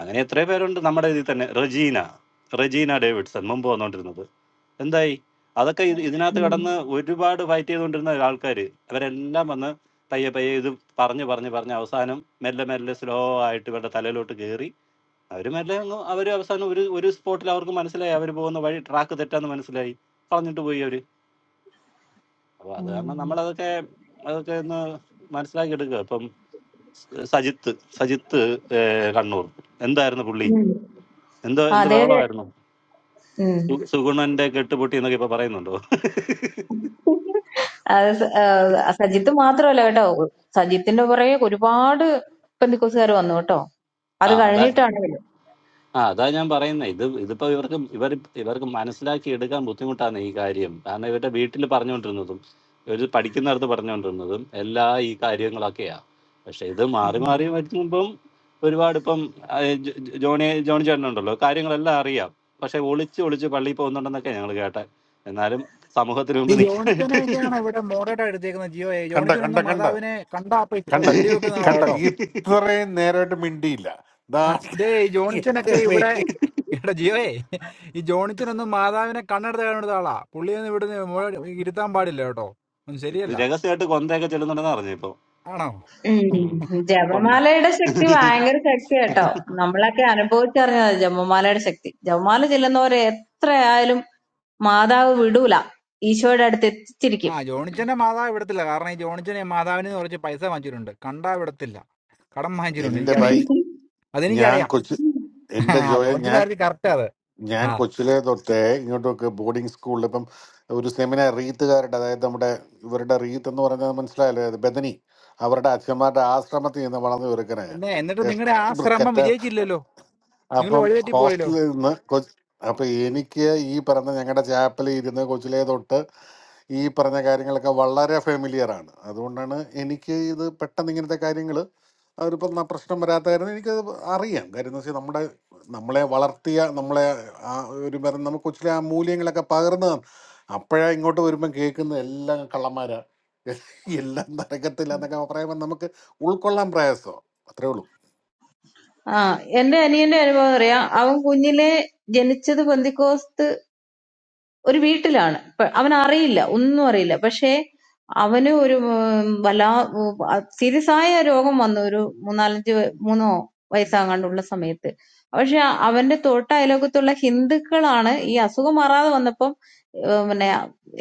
Speaker 7: അങ്ങനെ എത്രയോ പേരുണ്ട് നമ്മുടെ ഇതിൽ തന്നെ റജീന റജീന ഡേവിഡ്സൺ മുമ്പ് വന്നുകൊണ്ടിരുന്നത് എന്തായി അതൊക്കെ ഇത് ഇതിനകത്ത് കടന്ന് ഒരുപാട് ഫൈറ്റ് ചെയ്തുകൊണ്ടിരുന്ന ആൾക്കാർ അവരെല്ലാം വന്ന് പയ്യെ പയ്യെ ഇത് പറഞ്ഞ് പറഞ്ഞ് പറഞ്ഞ് അവസാനം മെല്ലെ മെല്ലെ സ്ലോ ആയിട്ട് ഇവരുടെ തലയിലോട്ട് കയറി അവർ മെല്ലെ അങ്ങ് അവർ അവസാനം ഒരു ഒരു സ്പോട്ടിൽ അവർക്ക് മനസ്സിലായി അവർ പോകുന്ന വഴി ട്രാക്ക് തെറ്റാന്ന് മനസ്സിലായി പറഞ്ഞിട്ട് പോയി അവർ അപ്പോൾ അത് കാരണം
Speaker 13: ഉം.
Speaker 7: നമ്മളതൊക്കെ അതൊക്കെ ഒന്ന് മനസ്സിലാക്കി എടുക്കുക ഇപ്പം സ- സജിത്ത് സജിത്ത് ഏഹ്, കണ്ണൂർ എന്തായിരുന്നു പുള്ളി
Speaker 13: ഉം.
Speaker 7: എന്തോ എന്ത്
Speaker 13: അതെ അതെ
Speaker 7: ബഹളമായിരുന്നു
Speaker 13: ഉം.
Speaker 7: സു- സുഗുണന്റെ കെട്ടുപൊട്ടി എന്നൊക്കെ ഇപ്പൊ പറയുന്നുണ്ടോ
Speaker 13: അത് സ- ആ, സജിത്ത് മാത്രമല്ല കേട്ടോ സജിത്തിന്റെ പുറകെ ഒരുപാട് പെന്തിക്കോസുകാർ വന്നു കേട്ടോ അത്
Speaker 7: ആ അതാ
Speaker 13: കഴിഞ്ഞിട്ടാണെങ്കിലും
Speaker 7: ആ അതാ ഞാൻ പറയുന്നത് ഇത് ഇതിപ്പോ ഇവർക്ക് ഇവർ ഇവർക്ക് മനസ്സിലാക്കി എടുക്കാൻ ബുദ്ധിമുട്ടാണ് ഈ കാര്യം കാരണം ഇവരുടെ വീട്ടിൽ പറഞ്ഞുകൊണ്ടിരുന്നതും ഇവർ പഠിക്കുന്നിടത്ത് പറഞ്ഞുകൊണ്ടിരുന്നതും എല്ലാ ഈ കാര്യങ്ങളൊക്കെയാ പക്ഷെ ഇത് മാറി മാറി വരുമ്പം ഒരുപാട് ഇപ്പം ആ, ജോ- ജോ- ജോണി ജോണി ചേട്ടനുണ്ടല്ലോ കാര്യങ്ങളെല്ലാം അറിയാം പക്ഷെ ഒളിച്ച് ഒളിച്ച് പള്ളിയിൽ പോകുന്നുണ്ടെന്നൊക്കെ ഞങ്ങൾ കേട്ടെ എന്നാലും സമൂഹത്തിന്
Speaker 16: ഈ
Speaker 7: മുമ്പ് നിൽക്കാനായിട്ട്
Speaker 16: ജോണിച്ചനെയൊക്കെയാണ് ഇവിടെ മോഡേറ്റ് എടുത്തേക്കുന്നത് ജിയോയെ
Speaker 11: കണ്ട കണ്ട
Speaker 16: ജോണിച്ചനൊന്നും
Speaker 11: കണ്ട
Speaker 16: മാതാവിനെ കണ്ടാ അപ്പൊ
Speaker 11: കണ്ട
Speaker 16: വെടിവെക്കുന്ന ആളാ
Speaker 11: കണ്ട
Speaker 16: കേട്ടോ
Speaker 11: ഇത്രയും നേരമായിട്ട് മിണ്ടിയില്ല ദാ
Speaker 16: ആ, ദേ ഈ
Speaker 11: എന്റെ
Speaker 16: ജോണിച്ചനൊക്കെ ഇവിടെ
Speaker 11: പേര്
Speaker 16: കേട്ടോ ജിയോയെ ഈ ജോണിച്ചനൊന്നും മാതാവിനെ കണ്ണെടുത്ത് കണ്ണെടുത്ത ആളാ പുള്ളിയൊന്നും ഇവിടുന്ന് മോഡ- ഇരുത്താൻ പാടില്ല കേട്ടോ ഒന്നും ശരിയല്ല
Speaker 7: രഹസ്യമായിട്ട് കൊന്തയൊക്കെ ചെല്ലുന്നുണ്ടെന്ന് അറിഞ്ഞു ഇപ്പൊ
Speaker 16: ആണോ
Speaker 7: ഉം.
Speaker 13: ഉം. ജപമാലയുടെ ശക്തി
Speaker 7: കൊന്ത
Speaker 13: ഭയങ്കര ശക്തി കേട്ടോ നമ്മളൊക്കെ അനുഭവിച്ചറിഞ്ഞത് ജപമാലയുടെ ശക്തി ജപമാല ചെല്ലുന്നവരെ എത്രയായാലും മാതാവ് വിടൂല ഈശോയുടെ അടുത്ത് എത്തിച്ചിരിക്കും
Speaker 16: ആ ജോണിച്ചന്റെ മാതാവ് വിടത്തില്ല കാരണം ഈ ജോണിച്ചനെ മാതാവിന് കുറച്ച് പൈസ വാങ്ങിച്ചിട്ടുണ്ട് കണ്ടാ വിടത്തില്ല കടം വാങ്ങിച്ചിട്ടുണ്ട്
Speaker 11: എന്റെ ഭായി
Speaker 16: എനിക്കറിയാം
Speaker 11: ഞാൻ
Speaker 16: അതെനിക്കറിയാം
Speaker 11: കൊച്ചു
Speaker 16: ആ
Speaker 11: എന്റെ ജോയ ഞാൻ
Speaker 16: ജോണിച്ചനായിരുന്നു കറക്റ്റ് അത്
Speaker 11: ഞാൻ
Speaker 16: ആ
Speaker 11: കൊച്ചിലെ തൊട്ടേ ഇങ്ങോട്ടൊക്കെ ബോർഡിംഗ് സ്കൂളിൽ ഇപ്പം ഒരു സെമിനാർ റീത്തുകാരുടെ അതായത് നമ്മുടെ ഇവരുടെ റീത്ത് എന്ന് പറഞ്ഞാൽ മനസ്സിലായല്ലോ അത് ബദനി അവരുടെ അച്ഛന്മാരുടെ ആശ്രമത്തിൽ നിന്ന് വളർന്നു ചെറുക്കനെ
Speaker 16: പിന്നെ എന്നിട്ട് നിങ്ങളുടെ ആ ശ്രമം
Speaker 11: കറ്റ
Speaker 16: വിജയിച്ചില്ലല്ലോ നിങ്ങൾ
Speaker 11: അപ്പം
Speaker 16: വഴിതെറ്റി പോയല്ലോ
Speaker 11: ഹോസ്റ്റലിൽ നിന്ന് കൊച്ച് അപ്പം എനിക്ക് ഈ പറഞ്ഞ ഞങ്ങളുടെ ചാപ്പലിൽ ഇരുന്ന് കൊച്ചിലെ തൊട്ട് ഈ പറഞ്ഞ കാര്യങ്ങളൊക്കെ വളരെ ഫെമിലിയർ ആണ് അതുകൊണ്ടാണ് എനിക്ക് ഇത് പെട്ടെന്ന് ഇങ്ങനത്തെ കാര്യങ്ങൾ അവരിപ്പം ന- പ്രശ്നം വരാത്ത കാര്യം എനിക്ക് അറിയാം കാര്യം എന്ന് വെച്ചാൽ നമ്മുടെ നമ്മളെ വളർത്തിയ നമ്മളെ ആ ഒരു മരം നമുക്ക് കൊച്ചിലെ ആ മൂല്യങ്ങളൊക്കെ പകർന്നതാണ് അപ്പോഴാ ഇങ്ങോട്ട് വരുമ്പം കേൾക്കുന്ന എല്ലാം കള്ളന്മാരാ എല്ലാം നരകത്തില്ല എന്നൊക്കെ പറയുമ്പോൾ നമുക്ക് ഉൾക്കൊള്ളാൻ പ്രയാസോ അത്രേ ഉള്ളൂ
Speaker 13: ആ എന്റെ അനിയന്റെ അനുഭവം അറിയാം അവൻ കുഞ്ഞിലെ ജനിച്ചത് പെന്തിക്കോസ്ത് ഒരു വീട്ടിലാണ്. പ- അവനറിയില്ല. ഒന്നും അറിയില്ല. പക്ഷേ അവന് ഒരു ഉം, വല്ലാ ഉം, അ- സീരിയസായ രോഗം വന്നു. ഒരു മൂന്നാലഞ്ച് വയ- മൂന്നോ വയസ്സാകാണ്ടുള്ള സമയത്ത്. പക്ഷേ അവന്റെ തൊട്ട അയലോക്കത്തുള്ള ഹിന്ദുക്കളാണ് ഈ അസുഖം മാറാതെ വന്നപ്പം ഏഹ് പിന്നെ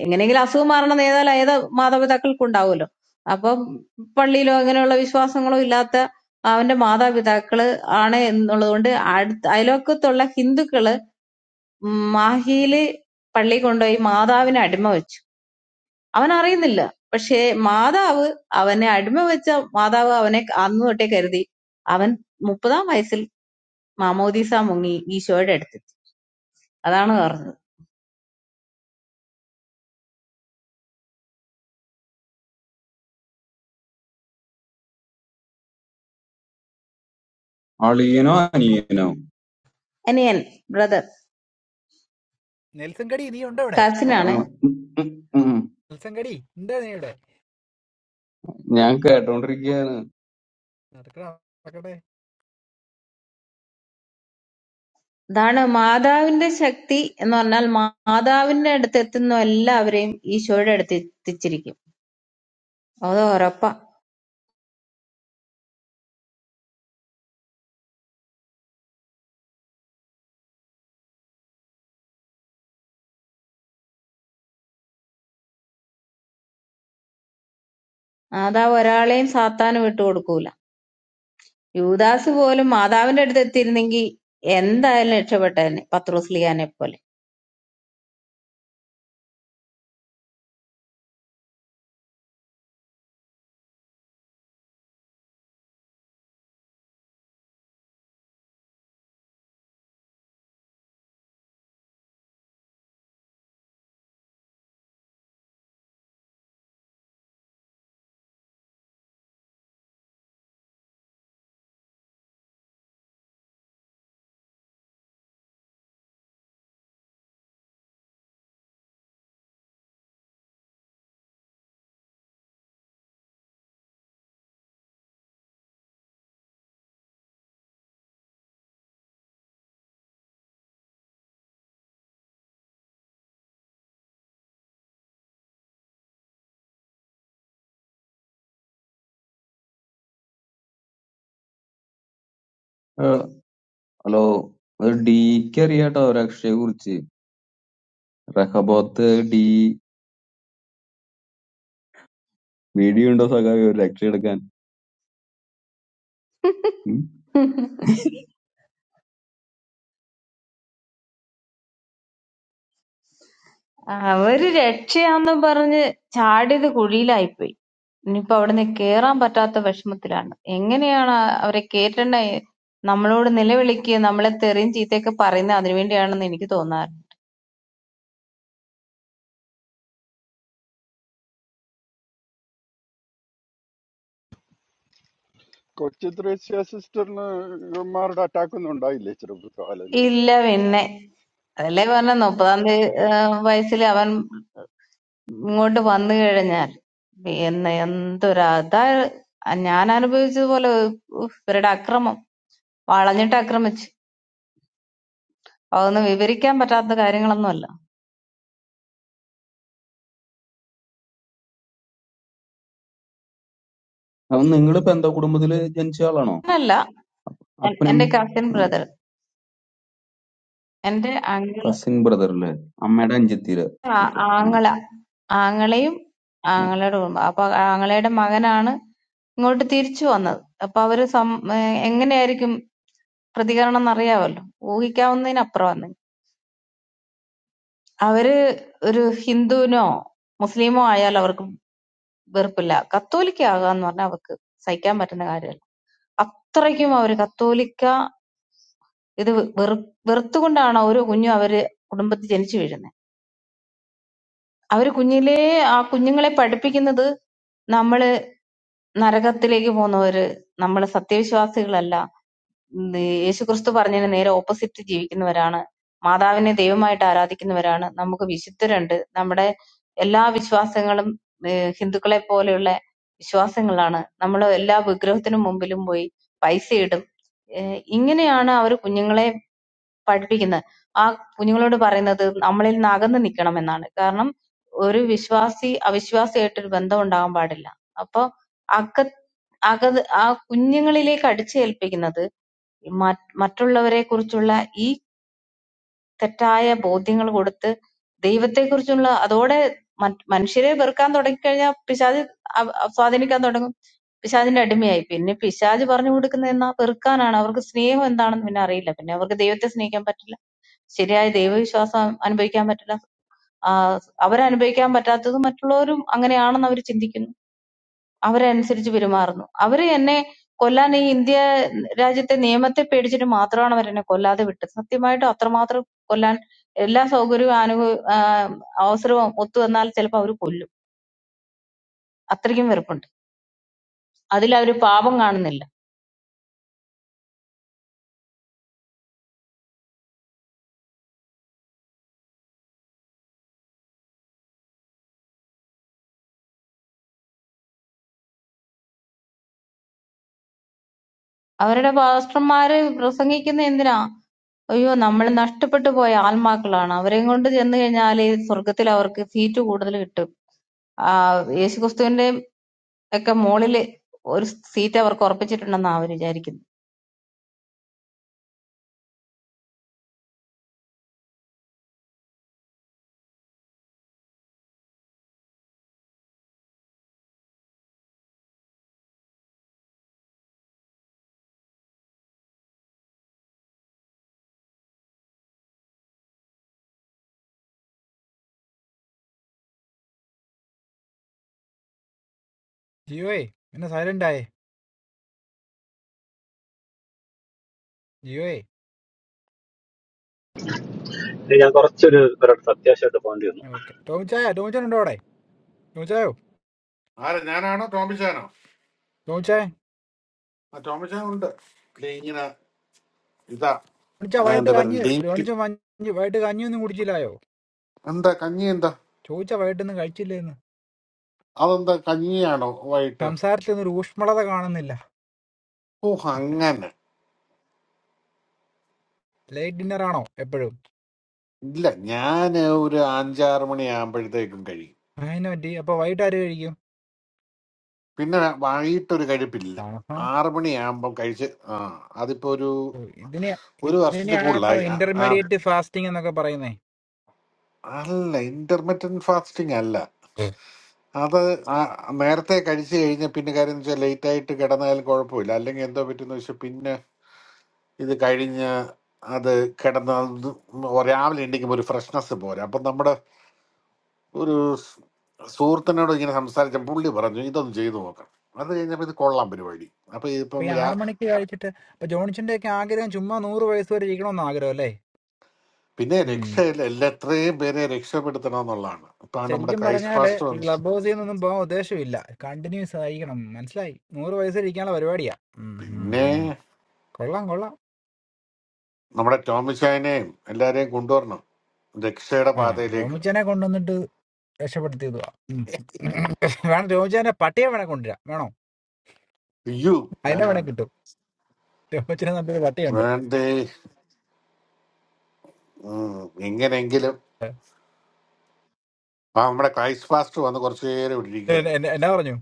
Speaker 13: എങ്ങനെയെങ്കിലും അസുഖം മാറണം എന്ന് ഏതായാലും ഏത് മാതാപിതാക്കൾക്കും ഉണ്ടാവുമല്ലോ. അപ്പം പള്ളിയിലോ അങ്ങനെയുള്ള വിശ്വാസങ്ങളോ ഇല്ലാത്ത അവന്റെ മാതാപിതാക്കള് ആണ് എന്നുള്ളതുകൊണ്ട് അടുത്ത അയലോക്കത്തുള്ള ഹിന്ദുക്കള് മാഹിയില് പള്ളി കൊണ്ടുപോയി മാതാവിനെ അടിമ വെച്ചു അവൻ അറിയുന്നില്ല പക്ഷേ മാതാവ് അവനെ അടിമ വെച്ച മാതാവ് അവനെ അന്ന് തൊട്ടേ കരുതി അവൻ മുപ്പതാം വയസ്സിൽ മാമോദീസ മുങ്ങി ഈശോയുടെ അടുത്തെത്തി അതാണ് പറഞ്ഞത്
Speaker 12: അളിയനോ അനിയനോ
Speaker 13: അനിയൻ ബ്രദർ
Speaker 16: നെൽസൺ കടി നീ ഉണ്ടോ ഇവിടെ
Speaker 12: ആ,
Speaker 13: കസിനാണ്
Speaker 12: ഉം, ഉം, ഉം.
Speaker 16: നെൽസൺ കടി എന്താ നീ ഇവിടെ
Speaker 12: ഞാൻ കേട്ടോണ്ടിരിക്കയാണ്
Speaker 16: നടക്കടാ നടക്കട്ടെ
Speaker 13: ഇതാണ് മാതാവിന്റെ ശക്തി എന്ന് പറഞ്ഞാൽ മാതാവിന്റെ അടുത്ത് എത്തുന്ന എല്ലാവരെയും ഈശോയുടെ അടുത്ത് എത്തിച്ചിരിക്കും അത് ഉറപ്പാ മാതാവ് ഒരാളെയും സാത്താന് വിട്ടുകൊടുക്കൂല യൂദാസ് പോലും മാതാവിന്റെ അടുത്ത് എത്തിയിരുന്നെങ്കിൽ എന്തായാലും രക്ഷപ്പെട്ടേനെ പത്രോസ്ലിയാനെ പോലെ
Speaker 12: ആ, ഹലോ അത് ഡിക്ക് അറിയാട്ടോ രക്ഷയെ കുറിച്ച് റഹബോത്ത് ഡി വീഡിയോ ഉണ്ടോ സഖാവ് രക്ഷ എടുക്കാൻ ഉം?
Speaker 13: അവര് രക്ഷയാന്നും പറഞ്ഞ് ചാടിയത് കുഴിയിലായിപ്പോയി ഇനിയിപ്പോ അവിടുന്ന് കേറാൻ പറ്റാത്ത വിഷമത്തിലാണ് എങ്ങനെയാണ് ആ- അവരെ കേറ്റണ്ട നമ്മളോട് നിലവിളിക്കുക നമ്മളെ തെറിയും ചീത്തയൊക്കെ പറയുന്നത് അതിനുവേണ്ടിയാണെന്ന് എനിക്ക് തോന്നാറ്
Speaker 14: കൊച്ചു ത്രേസ്യ സിസ്റ്ററിന് ഇവന്മാരുടെ അറ്റാക്ക് ഒന്നും ഉണ്ടായില്ലേ ചെറുപ്പകാലങ്ങളിൽ
Speaker 13: ഇല്ല പിന്നെ അതല്ലേ പറഞ്ഞ മുപ്പതാം തീയതി വയസ്സിൽ അവൻ ഇങ്ങോട്ട് വന്നു കഴിഞ്ഞാൽ എന്ന എന്തൊരു അതാ ഞാൻ അനുഭവിച്ചതുപോലെ ഉഫ്, ഇവരുടെ അക്രമം വളഞ്ഞിട്ട് ആക്രമിച്ചു അതൊന്നും വിവരിക്കാൻ പറ്റാത്ത കാര്യങ്ങളൊന്നുമല്ല
Speaker 12: അവൻ നിങ്ങളിപ്പോ എന്താ കുടുംബത്തില് ജനിച്ച ആളാണോ
Speaker 13: അങ്ങനല്ല എൻ-
Speaker 12: അപ്പനും
Speaker 13: എന്റെ കസിൻ ബ്രദർ എന്റെ അങ്കിള്
Speaker 12: കസിൻ ബ്രദർ അല്ലേ അമ്മയുടെ അഞ്ചെത്തിയില്ല
Speaker 13: ആ- ആങ്ങള ആങ്ങളെയും ആങ്ങളയുടെ കുടുംബം അപ്പൊ ആങ്ങളയുടെ മകനാണ് ഇങ്ങോട്ട് തിരിച്ചു വന്നത് അപ്പൊ അവര് സം ഏഹ് എങ്ങനെയായിരിക്കും പ്രതികരണം എന്നറിയാമല്ലോ ഊഹിക്കാവുന്നതിനപ്പുറം വന്നു അവര് ഒരു ഹിന്ദുവിനോ മുസ്ലിമോ ആയാൽ അവർക്ക് വെറുപ്പില്ല കത്തോലിക്ക ആകാന്ന് പറഞ്ഞാൽ അവർക്ക് സഹിക്കാൻ പറ്റുന്ന കാര്യമല്ല അത്രയ്ക്കും അവർ കത്തോലിക്ക ഇത് വെറു വെറുത്തുകൊണ്ടാണ് ഓരോ കുഞ്ഞും അവര് കുടുംബത്തിൽ ജനിച്ചു വീഴുന്നത് അവര് കുഞ്ഞിലേ ആ കുഞ്ഞുങ്ങളെ പഠിപ്പിക്കുന്നത് നമ്മള് നരകത്തിലേക്ക് പോകുന്നവര് നമ്മള് സത്യവിശ്വാസികളല്ല ഉം യേശുക്രിസ്തു പറഞ്ഞതിന് നേരെ ഓപ്പോസിറ്റ് ജീവിക്കുന്നവരാണ് മാതാവിനെ ദൈവമായിട്ട് ആരാധിക്കുന്നവരാണ് നമുക്ക് വിശുദ്ധരുണ്ട് നമ്മുടെ എല്ലാ വിശ്വാസങ്ങളും ഏഹ് ഹിന്ദുക്കളെ പോലെയുള്ള വിശ്വാസങ്ങളാണ് നമ്മൾ എല്ലാ വിഗ്രഹത്തിനും മുമ്പിലും പോയി പൈസ ഇടും ഏഹ് ഇങ്ങനെയാണ് അവർ കുഞ്ഞുങ്ങളെ പഠിപ്പിക്കുന്നത് ആ കുഞ്ഞുങ്ങളോട് പറയുന്നത് നമ്മളിൽ നിന്ന് അകന്ന് നിൽക്കണം എന്നാണ് കാരണം ഒരു വിശ്വാസി അവിശ്വാസിയായിട്ടൊരു ബന്ധം ഉണ്ടാകാൻ പാടില്ല അപ്പൊ അക അകത് ആ കുഞ്ഞുങ്ങളിലേക്ക് അടിച്ചേൽപ്പിക്കുന്നത് മറ്റ് മറ്റുള്ളവരെ കുറിച്ചുള്ള ഈ തെറ്റായ ബോധ്യങ്ങൾ കൊടുത്ത് ദൈവത്തെക്കുറിച്ചുള്ള അതോടെ മറ്റ് മനുഷ്യരെ വെറുക്കാൻ തുടങ്ങിക്കഴിഞ്ഞാൽ പിശാജ് അവ- അവ സ്വാധീനിക്കാൻ തുടങ്ങും. പിശാജിന്റെ അടിമയായി. പിന്നെ പിശാജ് പറഞ്ഞു കൊടുക്കുന്നത് എന്നാ വെറുക്കാനാണ്. അവർക്ക് സ്നേഹം എന്താണെന്ന് പിന്നെ അറിയില്ല. പിന്നെ അവർക്ക് ദൈവത്തെ സ്നേഹിക്കാൻ പറ്റില്ല. ശരിയായ ദൈവവിശ്വാസം അനുഭവിക്കാൻ പറ്റില്ല. ആ, അവരനുഭവിക്കാൻ പറ്റാത്തത് മറ്റുള്ളവരും അങ്ങനെയാണെന്ന് അവർ ചിന്തിക്കുന്നു. അവരനുസരിച്ച് പെരുമാറുന്നു. അവര് എന്നെ കൊല്ലാൻ ഈ ഇന്ത്യ രാജ്യത്തെ നിയമത്തെ പേടിച്ചിട്ട് മാത്രമാണ് അവരെന്നെ കൊല്ലാതെ വിട്ടത്. സത്യമായിട്ടും അത്രമാത്രം കൊല്ലാൻ എല്ലാ സൗകര്യവും അനുഭവ അവസരവും ഒത്തുവന്നാൽ ചിലപ്പോൾ അവര് കൊല്ലും. അത്രയ്ക്കും വെറുപ്പുണ്ട്. അതിലവര് പാപം കാണുന്നില്ല. അവരുടെ പാസ്റ്റർമാര് പ്രസംഗിക്കുന്നത് എന്തിനാ? അയ്യോ നമ്മൾ നഷ്ടപ്പെട്ടു പോയ ആത്മാക്കളാണ്. അവരെയും കൊണ്ട് ചെന്ന് കഴിഞ്ഞാല് സ്വർഗ്ഗത്തിൽ അവർക്ക് സീറ്റ് കൂടുതൽ കിട്ടും. ആ യേശുക്രിസ്തുവിന്റെയും ഒക്കെ മോളില് ഒരു സീറ്റ് അവർക്ക് ഉറപ്പിച്ചിട്ടുണ്ടെന്നാ അവര് വിചാരിക്കുന്നത്.
Speaker 16: ജിയോയെ പിന്നെ സൈലന്റ് ആയേ ജിയോയെ
Speaker 7: ഇനി ഞാൻ കുറച്ചൊരു ഒരിടത്ത് അത്യാവശ്യമായിട്ട് പോകേണ്ടി വന്നു
Speaker 16: ഓക്കെ ടോമിച്ചായ ടോമിച്ചാൻ ഉണ്ടോ അവിടെ ടോമിച്ചായോ
Speaker 11: ആരാ ഞാനാണോ ടോമിച്ചാനോ
Speaker 16: ടോമിച്ചായ
Speaker 11: ആ ടോമിച്ചാൻ ഉണ്ട് ദേ ഇങ്ങനെ ഇതാ
Speaker 16: ടോമിച്ചാ
Speaker 11: ആ,
Speaker 16: വൈകിട്ട്
Speaker 11: എന്താ പറയുക
Speaker 16: കഞ്ഞി
Speaker 11: ഡീറ്റ്
Speaker 16: രോണിച്ച മഞ്ഞ് വൈകിട്ട് കഞ്ഞിയൊന്നും കുടിച്ചില്ലായോ
Speaker 11: എന്താ കഞ്ഞി എന്താ
Speaker 16: ചോദിച്ചാ വൈകിട്ടൊന്നും കഴിച്ചില്ലേന്ന്
Speaker 11: അതെന്താ കഞ്ഞിയാണോ വൈകിട്ട്
Speaker 16: സംസാരത്തിലൊന്നും ഒരു ഊഷ്മളത കാണുന്നില്ല
Speaker 11: ഓ അങ്ങനെ
Speaker 16: ലൈറ്റ് ഡിന്നർ ആണോ എപ്പോഴും
Speaker 11: ഇല്ല ഞാൻ ഒരു അഞ്ചാറ് മണിയാകുമ്പോഴത്തേക്കും കഴിയും
Speaker 16: അതിനെ പറ്റി അപ്പൊ വൈകിട്ട് ആര് കഴിക്കും
Speaker 11: പിന്നെ വൈകിട്ടൊരു കഴിപ്പില്ല
Speaker 16: ആഹാ.
Speaker 11: ആറ് മണിയാകുമ്പം കഴിച്ച് ആ അതിപ്പോ ഒരു
Speaker 16: ഓ, ഇതിനെ
Speaker 11: ഒരു വർഷത്തിൽ
Speaker 16: ഇതിനെയാണോ
Speaker 11: കൂടുതലായി ആ- ആ,
Speaker 16: ഇന്റർമീഡിയറ്റ് ഫാസ്റ്റിംഗ് എന്നൊക്കെ പറയുന്നേ
Speaker 11: അല്ല ഇന്റർമീഡിയൻ ഫാസ്റ്റിംഗ് അല്ല അത് ആ, നേരത്തെ കഴിച്ചു കഴിഞ്ഞ പിന്നെ കാര്യം വെച്ചാൽ ലേറ്റ് ആയിട്ട് കിടന്നാലും കുഴപ്പമില്ല അല്ലെങ്കിൽ എന്തോ പറ്റുന്ന വെച്ചാൽ പിന്നെ ഇത് കഴിഞ്ഞ് അത് കിടന്ന രാവിലെ ഉണ്ടെങ്കിൽ ഒരു ഫ്രഷ്നെസ് പോരാ അപ്പം നമ്മുടെ ഒരു സ് സുഹൃത്തിനോട് ഇങ്ങനെ സംസാരിച്ച പുള്ളി പറഞ്ഞു ഇതൊന്ന് ചെയ്തു നോക്കണം അത് കഴിഞ്ഞപ്പോൾ ഇത് കൊള്ളാം പരിപാടി അപ്പൊ
Speaker 16: അപ്പൊ
Speaker 11: ഇതിപ്പം
Speaker 16: ഈ
Speaker 11: രാ
Speaker 16: ആറു മണിക്ക് കഴിച്ചിട്ട് ഇപ്പൊ ജോൺസിന്റെ ഒക്കെ ആഗ്രഹം ചുമ്മാ നൂറ് വയസ്സ് വരെ ഇരിക്കണമെന്ന് ആഗ്രഹം അല്ലേ
Speaker 11: പിന്നെ
Speaker 16: ഉം.
Speaker 11: രക്ഷയില്ല എല്ലാ എത്രയും പേരെ രക്ഷപ്പെടുത്തണം എന്നുള്ളതാണ് ഇപ്പൊ നമ്മുടെ
Speaker 16: ശരിക്കും
Speaker 11: ക്രൈസ്റ്റ്
Speaker 16: പറഞ്ഞാല്
Speaker 11: പാസ്റ്റർ
Speaker 16: ഈ
Speaker 11: വന്ന്
Speaker 16: ക്ലബ് ഹൗസിൽ നിന്നൊന്നും പോകാൻ ഉദ്ദേശമില്ല കണ്ടിന്യൂസ് ആയിരിക്കണം മനസ്സിലായി നൂറ് വയസ്സ് വരെ ഇരിക്കാനുള്ള പരിപാടിയാ ഉം, ഉം,
Speaker 11: പിന്നെ
Speaker 16: ഉം. കൊള്ളാം കൊള്ളാം
Speaker 11: നമ്മുടെ ടോമിച്ചായനെയും എല്ലാരെയും കൊണ്ടുവരണം രക്ഷയുടെ
Speaker 16: ആ
Speaker 11: പാതയിലേക്ക്
Speaker 16: രോമിച്ചനെ കൊണ്ടുവന്നിട്ട് രക്ഷപ്പെടുത്തിയത് വാ. ഉം. വേണം രോമിച്ചനെ പട്ടിയെ വേണേ കൊണ്ടുവരാം വേണോ
Speaker 11: അയ്യോ
Speaker 16: അതിനെ
Speaker 11: വേണ്ട
Speaker 16: വേണേ
Speaker 11: വേണ്ട
Speaker 16: കിട്ടും രോമിച്ചനെ നല്ലൊരു പട്ടിയുണ്ട്
Speaker 11: വേണ്ടേ ഉം, എങ്ങനെയെങ്കിലും ആ നമ്മുടെ ക്രൈസ്റ്റ് പാസ്റ്റർ വന്ന് കുറച്ചു നേരം ഇവിടെ
Speaker 16: എ-
Speaker 11: ഇരിക്കുകയായിരുന്നു
Speaker 16: എ- എന്നാ പറഞ്ഞു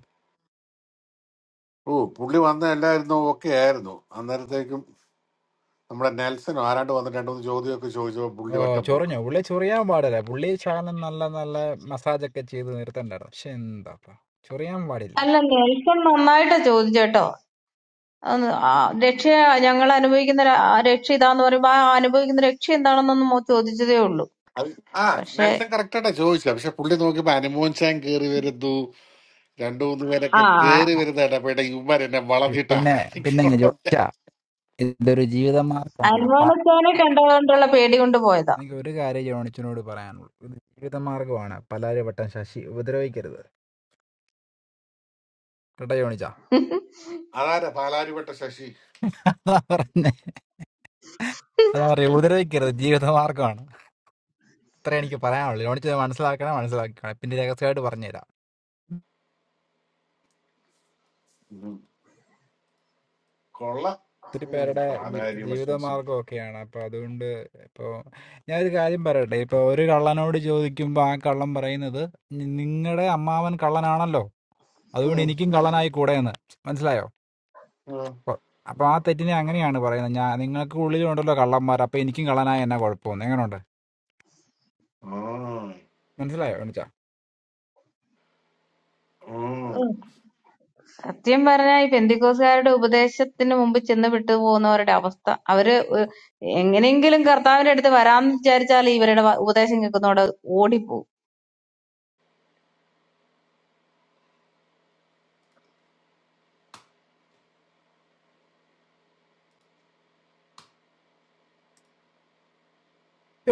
Speaker 11: ഓ പുള്ളി വന്ന എല്ലായിരുന്നു ഓക്കെ ആയിരുന്നു അന്നേരത്തേക്കും നമ്മുടെ നെൽസനും ആരാണ്ട് വന്നിട്ട് രണ്ടു മൂന്ന് ചോദ്യമൊക്കെ ചോദിച്ചപ്പോ പുള്ളി
Speaker 16: ഓ
Speaker 11: ഒറ്റ പോക്ക്
Speaker 16: ചൊറിഞ്ഞോ പുള്ളി ചൊറിയാൻ പാടില്ല പുള്ളി ശകലം നല്ല നല്ല മസാജ് ഒക്കെ ചെയ്ത് നിർത്തണ്ടായിരുന്നു പക്ഷെ എന്താപ്പാ ചൊറിയാൻ പാടില്ല
Speaker 13: അല്ല നെൽസൺ നന്നായിട്ടാ ചോദിച്ചേട്ടോ അന്ന് ആ രക്ഷ ഞങ്ങൾ അനുഭവിക്കുന്ന ര- ആ രക്ഷ ഇതാന്ന് പറയുമ്പോ ആ അനുഭവിക്കുന്ന രക്ഷ എന്താണെന്നൊന്നും മോ ചോദിച്ചതേ ഉള്ളൂ
Speaker 11: അത് ആ
Speaker 13: പക്ഷെ
Speaker 11: നെൽസൺ correct ആയിട്ടാ ചോദിച്ചത് പക്ഷെ പുള്ളി നോക്കിയപ്പോ അനുമോൻ ചാൻ കേറി വരുന്നു രണ്ടു മൂന്ന്
Speaker 13: ആ
Speaker 11: പേരൊക്കെ കേറി വരുന്ന ഇടപെട്ട ഇവർ എന്നെ
Speaker 16: പി-
Speaker 11: വളർത്തിട്ട്
Speaker 16: പിന്നെ പിന്നെ ഞാൻ
Speaker 11: ആക്രമിക്കണം
Speaker 16: ചോദിച്ചാ ഇതൊരു ജീവിതമാർഗമാണ് അപ്പ
Speaker 13: അനുമാനസ്താനെ കണ്ടതുകൊണ്ടുള്ള പേടി കൊണ്ട് പോയതാ
Speaker 16: എനിക്ക് ഒരു കാര്യം ജോണിച്ചനോട് പറയാനുള്ളൂ ഇത് ജീവിതമാർഗമാണ് പലരും വട്ടം ശശി ഉപദ്രവിക്കരുത് കേട്ടോ ജോണിച്ചാ
Speaker 11: അതാരാ പാലാരിവട്ട ശശി
Speaker 16: അതാ പറഞ്ഞേ അതാ പറയുക ഉപദ്രവിക്കരുത് ജീവിതമാർഗമാണ് അത്ര എനിക്ക് പറയാനുള്ളൂ ജോണിച്ച മനസ്സിലാക്കണേ മനസ്സിലാക്കണം പിന്നെ രഹസ്യമായിട്ട് പറഞ്ഞുതരാം
Speaker 11: ഉം. കൊള്ള
Speaker 16: ഒത്തിരി
Speaker 11: ഉം.
Speaker 16: പേരുടെ ജി-
Speaker 11: പാലാരിവട്ട ശശി
Speaker 16: ജീവിതമാർഗ്ഗമൊക്കെയാണ് അപ്പൊ അതുകൊണ്ട് ഇപ്പോ ഞാനൊരു കാര്യം പറയട്ടെ ഇപ്പൊ ഒരു കള്ളനോട് ചോദിക്കുമ്പോ ആ കള്ളൻ പറയുന്നത് നിങ്ങളുടെ അമ്മാവൻ കള്ളനാണല്ലോ അതുകൊണ്ട്
Speaker 11: ഉം.
Speaker 16: എനിക്കും കള്ളനായി കൂടെ എന്ന് മനസ്സിലായോ
Speaker 11: ഉം.
Speaker 16: അപ്പൊ അപ്പൊ ആ തെറ്റിനെ അങ്ങനെയാണ് പറയുന്നത് ഞാൻ നിങ്ങൾക്ക് ഉള്ളിലുണ്ടല്ലോ കള്ളന്മാർ അപ്പൊ എനിക്കും കള്ളനായ എന്നാ കുഴപ്പമൊന്നും എങ്ങനെയുണ്ട്
Speaker 11: ഉം.
Speaker 16: മനസ്സിലായോ യോണിച്ച
Speaker 11: ഉം.
Speaker 13: ഉം. സത്യം പറഞ്ഞാൽ ഈ പെന്തിക്കോസുകാരുടെ ഉപദേശത്തിന് മുമ്പ് ചെന്ന് വിട്ടുപോകുന്നവരുടെ അവസ്ഥ അവര് ഒ- എങ്ങനെയെങ്കിലും കർത്താവിന്റെ അടുത്ത് വരാമെന്ന് വിചാരിച്ചാൽ ഇവരുടെ വ- ഉപദേശം കേൾക്കുന്നതോടെ ഓടിപ്പോവും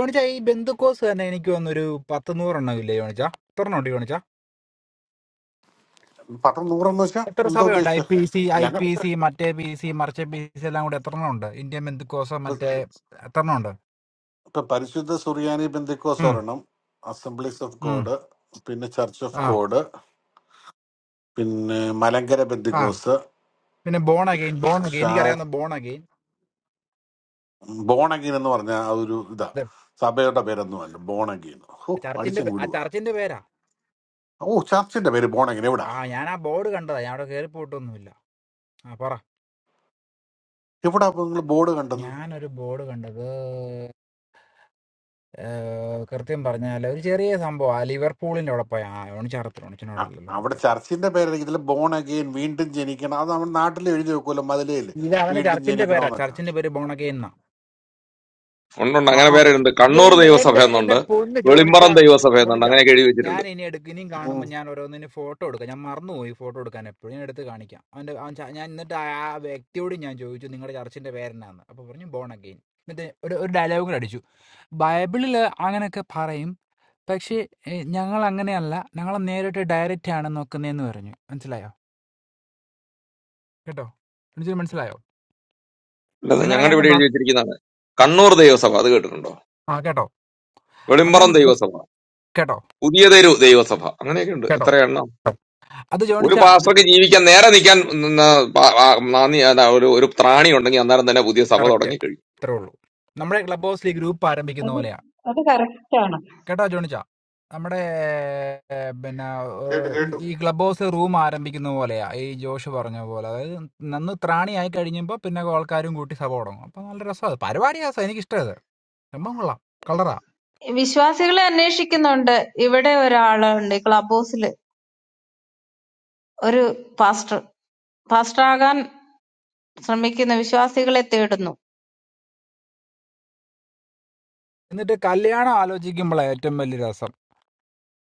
Speaker 16: യോണിച്ച ഈ ബന്ധുക്കോസ് തന്നെ എനിക്ക് വന്നൊരു പത്ത് നൂറെണ്ണം ഇല്ലേ യോണിച്ച എത്ര ഉണ്ട് യോണിച്ച?
Speaker 11: പത്രം നൂറെന്ന് വെച്ചാ
Speaker 16: എത്ര
Speaker 11: എന്താ
Speaker 16: സഭയുണ്ട് ഐ
Speaker 11: ഉദ്ദേശിച്ച
Speaker 16: P C I P C മറ്റേ പി സി മറിച്ച പി സി എല്ലാം കൂടെ എത്ര ഉണ്ട് ഇന്ത്യൻ ബന്ധുക്കോസം മറ്റേ എത്ര ഉണ്ട്
Speaker 11: ഇപ്പൊ പരിശുദ്ധ സുറിയാനി ബന്ധുക്കോസ്
Speaker 16: ഉം,
Speaker 11: ഒരെണ്ണം അസംബ്ലീസ് ഓഫ്
Speaker 16: ഉം,
Speaker 11: ഗോഡ് പിന്നെ ചർച്ച് ഓഫ്
Speaker 16: ആ
Speaker 11: ഗോഡ് പിന്നെ മലങ്കര
Speaker 16: ആ
Speaker 11: പെന്തിക്കോസ്
Speaker 16: പിന്നെ ബോൺ അഗെയിൻ ബോൺ അഗെയിൻ
Speaker 11: ഷാ
Speaker 16: എനിക്കറിയാവുന്ന ബോൺ അഗെയിൻ
Speaker 11: ബോണഗീൻ എന്ന് പറഞ്ഞാൽ അതൊരു ഇതാ
Speaker 16: ഇത്
Speaker 11: സഭയുടെ പേരൊന്നും അല്ല ബോണഗീൻ ഓ
Speaker 16: ചർച്ചിന്റെ
Speaker 11: അടിച്ചങ്ങ്
Speaker 16: പേ- ആ
Speaker 11: വിടുക
Speaker 16: ചർച്ചിന്റെ പേരാ
Speaker 11: ഓ ചർച്ചിന്റെ പേര് ബോണഗീൻ എവിടാ
Speaker 16: ആ ഞാൻ ആ ബോർഡ് കണ്ടതാ ഞാൻ അവിടെ കയറി പോയിട്ടൊന്നുമില്ല ആ പറ
Speaker 11: എവിടാ അപ്പൊ നിങ്ങൾ ബോർഡ് കണ്ടത്
Speaker 16: ഞാനൊരു ബോർഡ് കണ്ടത് ഏ, കൃത്യം പറഞ്ഞാൽ ഒരു ചെറിയ സംഭവം ആ ലിവർപൂളിന്റെ അവിടെ പോയ ആ ഓണിച്ചറത്തിൽ
Speaker 11: അ-
Speaker 16: ഓണിച്ചനോടല്ലോ
Speaker 11: അവിടെ
Speaker 16: ഓക്കെ,
Speaker 11: ചർച്ചിന്റെ പേരായിരിക്കും ഇതിൽ ബോൺ അഗെയിൻ വീണ്ടും ജനിക്കണം അത് നമ്മുടെ നാട്ടിൽ എഴുതി വെക്കുമല്ലോ മതിലേല്
Speaker 16: ഇത് അവന്റെ
Speaker 11: വീണ്ടും
Speaker 16: ചർച്ചിന്റെ പേരാ
Speaker 11: ജനിക്കണമെന്നൊക്കെ
Speaker 16: ചർച്ചിന്റെ പേര് ബോൺ അഗെയിൻ
Speaker 4: ഉണ്ടുണ്ട് അങ്ങനെ
Speaker 11: ആഹാ
Speaker 4: പേരുണ്ട് കണ്ണൂർ
Speaker 16: എന്റെ
Speaker 4: ദൈവസഭ
Speaker 16: എന്റെ എന്നെ
Speaker 4: എന്നുണ്ട്
Speaker 16: പൊന്ന് ജോണിച്ച
Speaker 4: വെളിമ്പറം ദൈവസഭ എന്നുണ്ട്
Speaker 16: മോണിച്ച
Speaker 4: അങ്ങനെയൊക്കെ എഴുതി
Speaker 16: ഞാൻ
Speaker 4: വെച്ചിട്ടുണ്ട്
Speaker 16: ഇനി എടുക്ക ഇനിയും
Speaker 11: ഉം.
Speaker 16: കാണുമ്പോൾ ഞാൻ ഓരോന്നിന് ഫോട്ടോ എടുക്കാം ഞാൻ മറന്നുപോയി ഫോട്ടോ എടുക്കാൻ എപ്പോഴും ഞാൻ എടുത്ത് കാണിക്കാം അവന്റെ അവൻ ച- ഞാൻ എന്നിട്ട് ആ ആ വ്യക്തിയോട് ഞാൻ ചോദിച്ചു നിങ്ങളുടെ ചർച്ചിന്റെ പേരെന്നാന്ന് അപ്പൊ പറഞ്ഞു ബോൺ അഗെയിൻ എന്നിട്ട് ഒരു ഒരു ഡയലോഗ് അടിച്ചു ബൈബിളിൽ അങ്ങനെയൊക്കെ പറയും പക്ഷേ ഏ, ഞങ്ങൾ അങ്ങനെയല്ല ഞങ്ങൾ നേരിട്ട് ഡയറക്റ്റ് ആണ് നോക്കുന്നതെന്ന് പറഞ്ഞു മനസ്സിലായോ കേട്ടോ മനസ്സിലായോ
Speaker 4: അല്ല
Speaker 16: ഞങ്ങൾ
Speaker 4: ഞങ്ങളുടെ ഇവിടെ
Speaker 16: അങ്ങനെ
Speaker 4: എഴുതി വെച്ചിരിക്കുന്നതാണ് കണ്ണൂർ ദൈവസഭ അത് കേട്ടിട്ടുണ്ടോ
Speaker 16: ആ കേട്ടോ അപ്പം
Speaker 4: വെളിമ്പറം ദൈവസഭ
Speaker 16: കേട്ടോ
Speaker 4: പുതിയ തെരു ദൈവസഭ അങ്ങനെയൊക്കെ ഉണ്ട്
Speaker 16: കേട്ടോ
Speaker 4: എത്ര എണ്ണം
Speaker 16: കേട്ടോ. അത്
Speaker 4: ഒരു
Speaker 16: ജോണിച്ച
Speaker 4: പാസ്റ്റർക്ക് ജീവിക്കാൻ നേരെ നിൽക്കാൻ നിന്ന പാ- ആ- ആ, നാന്ദി അതാ ഒരു ഒരു ത്രാണി ഉണ്ടെങ്കിൽ അന്നേരം തന്നെ പുതിയ സഭ
Speaker 16: കറക്റ്റ്
Speaker 4: തുടങ്ങി കഴിയും
Speaker 16: ഇത്രേ ഉള്ളൂ നമ്മുടെ ക്ലബ് ഹൗസിൽ ഗ്രൂപ്പ് ആരംഭിക്കുന്ന
Speaker 13: അത്
Speaker 16: പോലെയാ
Speaker 13: അത് correct ആണ്
Speaker 16: കേട്ടോ ജോണിച്ചാ നമ്മുടെ ഏർ, പിന്നെ
Speaker 11: കേട്ടു
Speaker 16: ഏർ, ഈ
Speaker 11: കേട്ടു
Speaker 16: ഈ ക്ലബ് ഹൗസ് റൂം ആരംഭിക്കുന്ന പോലെയാ ഈ ജോഷ് പറഞ്ഞ പോലെ അതായത് നന്ന് ത്രാണിയായി കഴിയുമ്പോൾ പിന്നെ ആൾക്കാരും കൂട്ടി സഭ തുടങ്ങും അപ്പൊ നല്ല രസമാണ് പരിപാടിയാ സ- എനിക്ക് ഇഷ്ടമായത് സംഭവം കൊള്ളാം കളറാ
Speaker 13: വിശ്വാസികളെ അന്വേഷിക്കുന്നുണ്ട്. ഇവിടെ ഒരാളുണ്ട് ഈ ക്ലബ് ഹൗസിൽ ഒരു പാസ്റ്റർ പാസ്റ്റർ ആകാൻ ശ്രമിക്കുന്ന വിശ്വാസികളെ തേടുന്നു.
Speaker 16: എന്നിട്ട് കല്യാണം ആലോചിക്കുമ്പോഴാണ് ഏറ്റവും വലിയ രസം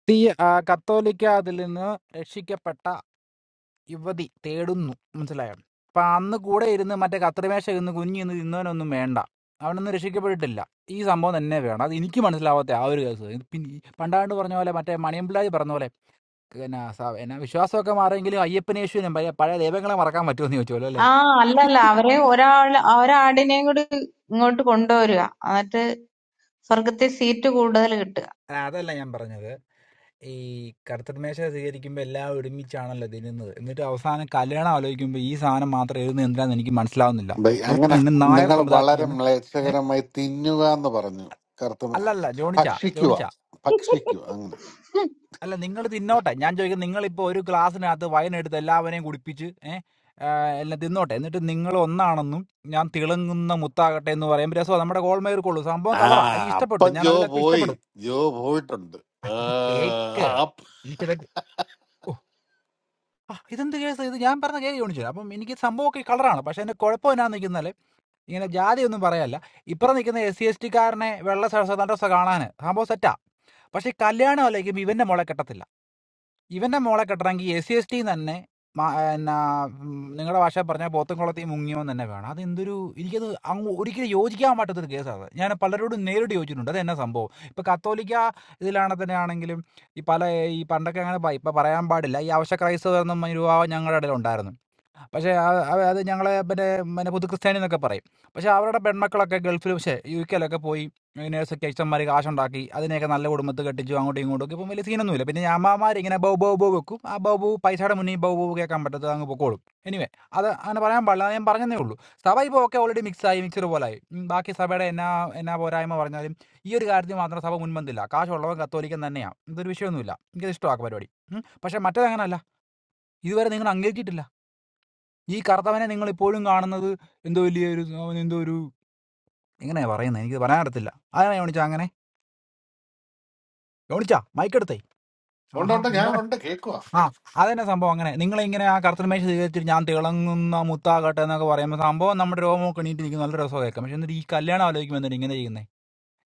Speaker 16: തീ ആ, കത്തോലിക്ക അതിൽ നിന്ന് രക്ഷിക്കപ്പെട്ട യുവതി തേടുന്നു മനസ്സിലായോ അപ്പം അന്ന് കൂടെ ഇരുന്ന് മറ്റേ കത്രിമേശ ഇരുന്ന് കുഞ്ഞിന്ന് തിന്നവനൊന്നും വേണ്ട അവനൊന്നും രക്ഷിക്കപ്പെട്ടിട്ടില്ല ഈ സംഭവം തന്നെ വേണം അത് എനിക്ക് മനസ്സിലാവാത്ത ആ ഒരു കേസ് ഇത് പിന്നെ ഈ പണ്ടാണ്ട് പറഞ്ഞ പോലെ മറ്റേ മണിയമ്പിള്ളാജി പറഞ്ഞ പോലെ പിന്നെ സ- പിന്നെ വിശ്വാസമൊക്കെ മാറിയെങ്കിലും അയ്യപ്പനെ യേശുവിനും പഴയ പഴയ ദൈവങ്ങളെ മറക്കാൻ പറ്റുമെന്ന് ചോദിച്ചോല്ലോ അല്ലേ
Speaker 13: ആ അല്ലല്ല അവരെ ഒരാൾ ഒരാടിനെയും കൂടി ഇങ്ങോട്ട് കൊണ്ടുവരിക എന്നിട്ട് സ്വർഗത്തിൽ സീറ്റ് കൂടുതൽ കിട്ടുക.
Speaker 16: അല്ല, അതല്ല ഞാൻ പറഞ്ഞത് ഈ കർത്തൃമേശ സ്വീകരിക്കുമ്പോൾ എല്ലാം ഒരുമിച്ചാണല്ലോ തിന്നുന്നത് എന്നിട്ട് അവസാനം കല്യാണം ആലോചിക്കുമ്പോൾ ഈ സാധനം മാത്രം എഴുതുന്നത് എന്തിനാന്ന് എനിക്ക് മനസ്സിലാവുന്നില്ല
Speaker 11: ബൈ, അങ്ങനെ
Speaker 16: അപ്പോൾ നായർ
Speaker 11: നിങ്ങൾ
Speaker 16: സമുദായത്തിൽ
Speaker 11: വളരെ
Speaker 16: നിന്ന്
Speaker 11: മ്ലേച്ഛകരമായി തിന്നുക എന്ന് പറഞ്ഞു കറുത്ത
Speaker 16: അല്ലല്ല ജോണിച്ച
Speaker 11: ഭക്ഷിക്കുക
Speaker 16: ജോണിച്ച
Speaker 11: ഭക്ഷിക്കുക അങ്ങനെ
Speaker 16: അല്ല നിങ്ങൾ തിന്നോട്ടെ ഞാൻ ചോദിക്കുന്നത് നിങ്ങളിപ്പോൾ ഒരു ഗ്ലാസ്സിനകത്ത് വൈനെടുത്ത് എല്ലാവരെയും കുടിപ്പിച്ച് ഏ, ആ, എല്ലാം തിന്നോട്ടെ എന്നിട്ട് നിങ്ങൾ ഒന്നാണെന്നും ഞാൻ തിളങ്ങുന്ന മുത്താകട്ടെ എന്ന് പറയുമ്പോൾ രസം നമ്മുടെ ഗോൾമേർക്കുള്ളൂ സംഭവം
Speaker 11: ആ
Speaker 16: കളറാ എനിക്ക്
Speaker 11: അപ്പൊ
Speaker 16: ഇഷ്ടപ്പെട്ടു ഞാൻ
Speaker 11: ജോ
Speaker 16: അതിലൊക്കെ
Speaker 11: പോയി
Speaker 16: ഇഷ്ടപ്പെടും
Speaker 11: ജോ പോയിട്ടുണ്ട്
Speaker 16: ആ,
Speaker 11: ആ,
Speaker 16: ഇത് കേക്ക്
Speaker 11: അപ്പ-
Speaker 16: എനിക്കതൊക്കെ ഓ ആ, ഇതെന്ത് കേസ് ഇത് ഞാൻ പറഞ്ഞ കേക്ക് ചോദിച്ചു അപ്പം എനിക്ക് സംഭവമൊക്കെ കളറാണ് പക്ഷെ എൻ്റെ കുഴപ്പം എന്നാന്ന് നിൽക്കുന്നാല് ഇങ്ങനെ ജാതി ഒന്നും പറയല്ല ഇപ്പുറം നിൽക്കുന്ന എസ് സി എസ് ടി കാരനെ വെള്ള സ- സ- ഡ്രസ്സ് കാണാൻ സംഭവം സെറ്റാ പക്ഷെ ഈ കല്യാണം ആലോചിക്കുമ്പോൾ ഇവന്റെ മോളെ കെട്ടത്തില്ല ഇവന്റെ മോളെ കെട്ടണമെങ്കിൽ എസ് സി എസ് ടി തന്നെ മാ- എന്നാ നിങ്ങളുടെ ഭാഷ പറഞ്ഞ പോത്തൻകുളത്തിൽ മുങ്ങിയവൻ തന്നെ വേണം അതെന്തൊരു എനിക്കത് അങ്ങ് ഒരിക്കലും യോജിക്കാൻ പറ്റാത്തൊരു കേസാണ് ഞാൻ പലരോടും നേരിട്ട് യോജിച്ചിട്ടുണ്ട് അത് എന്നാ സംഭവം ഇപ്പോൾ കത്തോലിക്ക ഇതിലാണെ തന്നെ ആണെങ്കിലും ഈ പല ഈ പണ്ടൊക്കെ അങ്ങനെ പ- ഇപ്പൊ പറയാൻ പാടില്ല ഈ അവശ ക്രൈസ്തവർ എന്നും രൂപ ഞങ്ങളുടെ ഇടയിൽ ഉണ്ടായിരുന്നു പക്ഷേ ആ അവ അത് ഞങ്ങളെ പിന്നെ പിന്നെ പുതുക്രിസ്ത്യാനിന്നൊക്കെ പറയും. പക്ഷേ അവരുടെ പെൺമക്കളൊക്കെ ഗൾഫില് പക്ഷേ യുകെയിലൊക്കെ പോയി നേഴ്സൊക്കെ അച്ഛന്മാര് കാശുണ്ടാക്കി അതിനെയൊക്കെ നല്ല കുടുംബത്തിൽ കെട്ടിച്ചു അങ്ങോട്ടും ഇങ്ങോട്ടും ഒക്കെ. ഇപ്പം വലിയ സീനൊന്നുമില്ല. പിന്നെ ഈ അമ്മാവന്മാരിങ്ങനെ ബൗ ബൗ ബൗ വെക്കും. ആ ബൗ ബൗ പൈസയുടെ മുന്നിൽ ബൗ ബൗ കേൾക്കാൻ പറ്റാത്തത് അങ്ങ് പൊക്കോളും. എനിവേ അത് അങ്ങനെ പറയാൻ പാടില്ല. അത് ഞാൻ പറഞ്ഞെന്നേ ഉള്ളൂ. സഭ ഇപ്പോൾ ഒക്കെ ഓൾറെഡി മിക്സായി മിക്സഡ് പോലായി. ഉം, ബാക്കി സഭയുടെ എന്നാ എന്നാ പോരായ്മ പറഞ്ഞാലും ഈ ഒരു കാര്യത്തിൽ മാത്രം സഭ മുൻപന്തില്ല. കാശുള്ളവൻ കത്തോലിക്കൻ തന്നെയാണ്. ഇതൊരു വിഷയമൊന്നുമില്ല. എനിക്കത് ഇഷ്ടമാണ് ആ പരിപാടി. ഉം. പക്ഷേ മറ്റേത് അങ്ങനല്ല. ഇതുവരെ നിങ്ങൾ അംഗീകരിച്ചിട്ടില്ല. ഈ കറുത്തവനെ നിങ്ങൾ ഇപ്പോഴും കാണുന്നത് എന്തോ വലിയ ഒരു അവൻ എന്തോ ഒരു എങ്ങനെയാ പറയുന്നത് എനിക്ക് പറയാൻ അറിയത്തില്ല അതാണ് യോണിച്ച അങ്ങനെ യോണിച്ച മൈക്കെടുത്തേ
Speaker 11: ഉണ്ട്
Speaker 16: ആഹാ
Speaker 11: ഉണ്ട് ഞാൻ
Speaker 16: മുണ്ടാ
Speaker 11: ഇവിടെ ഉണ്ട് കേക്കുവാ
Speaker 16: ആ അതന്നെ സംഭവം അങ്ങനെ നിങ്ങൾ ഇങ്ങനെ ആ കറുത്തമേശ സ്വീകരിച്ചിട്ട് ഞാൻ തിളങ്ങുന്ന മുത്താകട്ടെ എന്നൊക്കെ പറയുമ്പോൾ സംഭവം നമ്മുടെ രോമമൊക്കെ എണീറ്റ് നിൽക്കുന്ന നല്ല രസം കേൾക്കാം പക്ഷെ എന്നിട്ട് ഈ കല്യാണം ആലോചിക്കുമ്പോൾ എന്തിനാ ഇങ്ങനെ ചെയ്യുന്നത്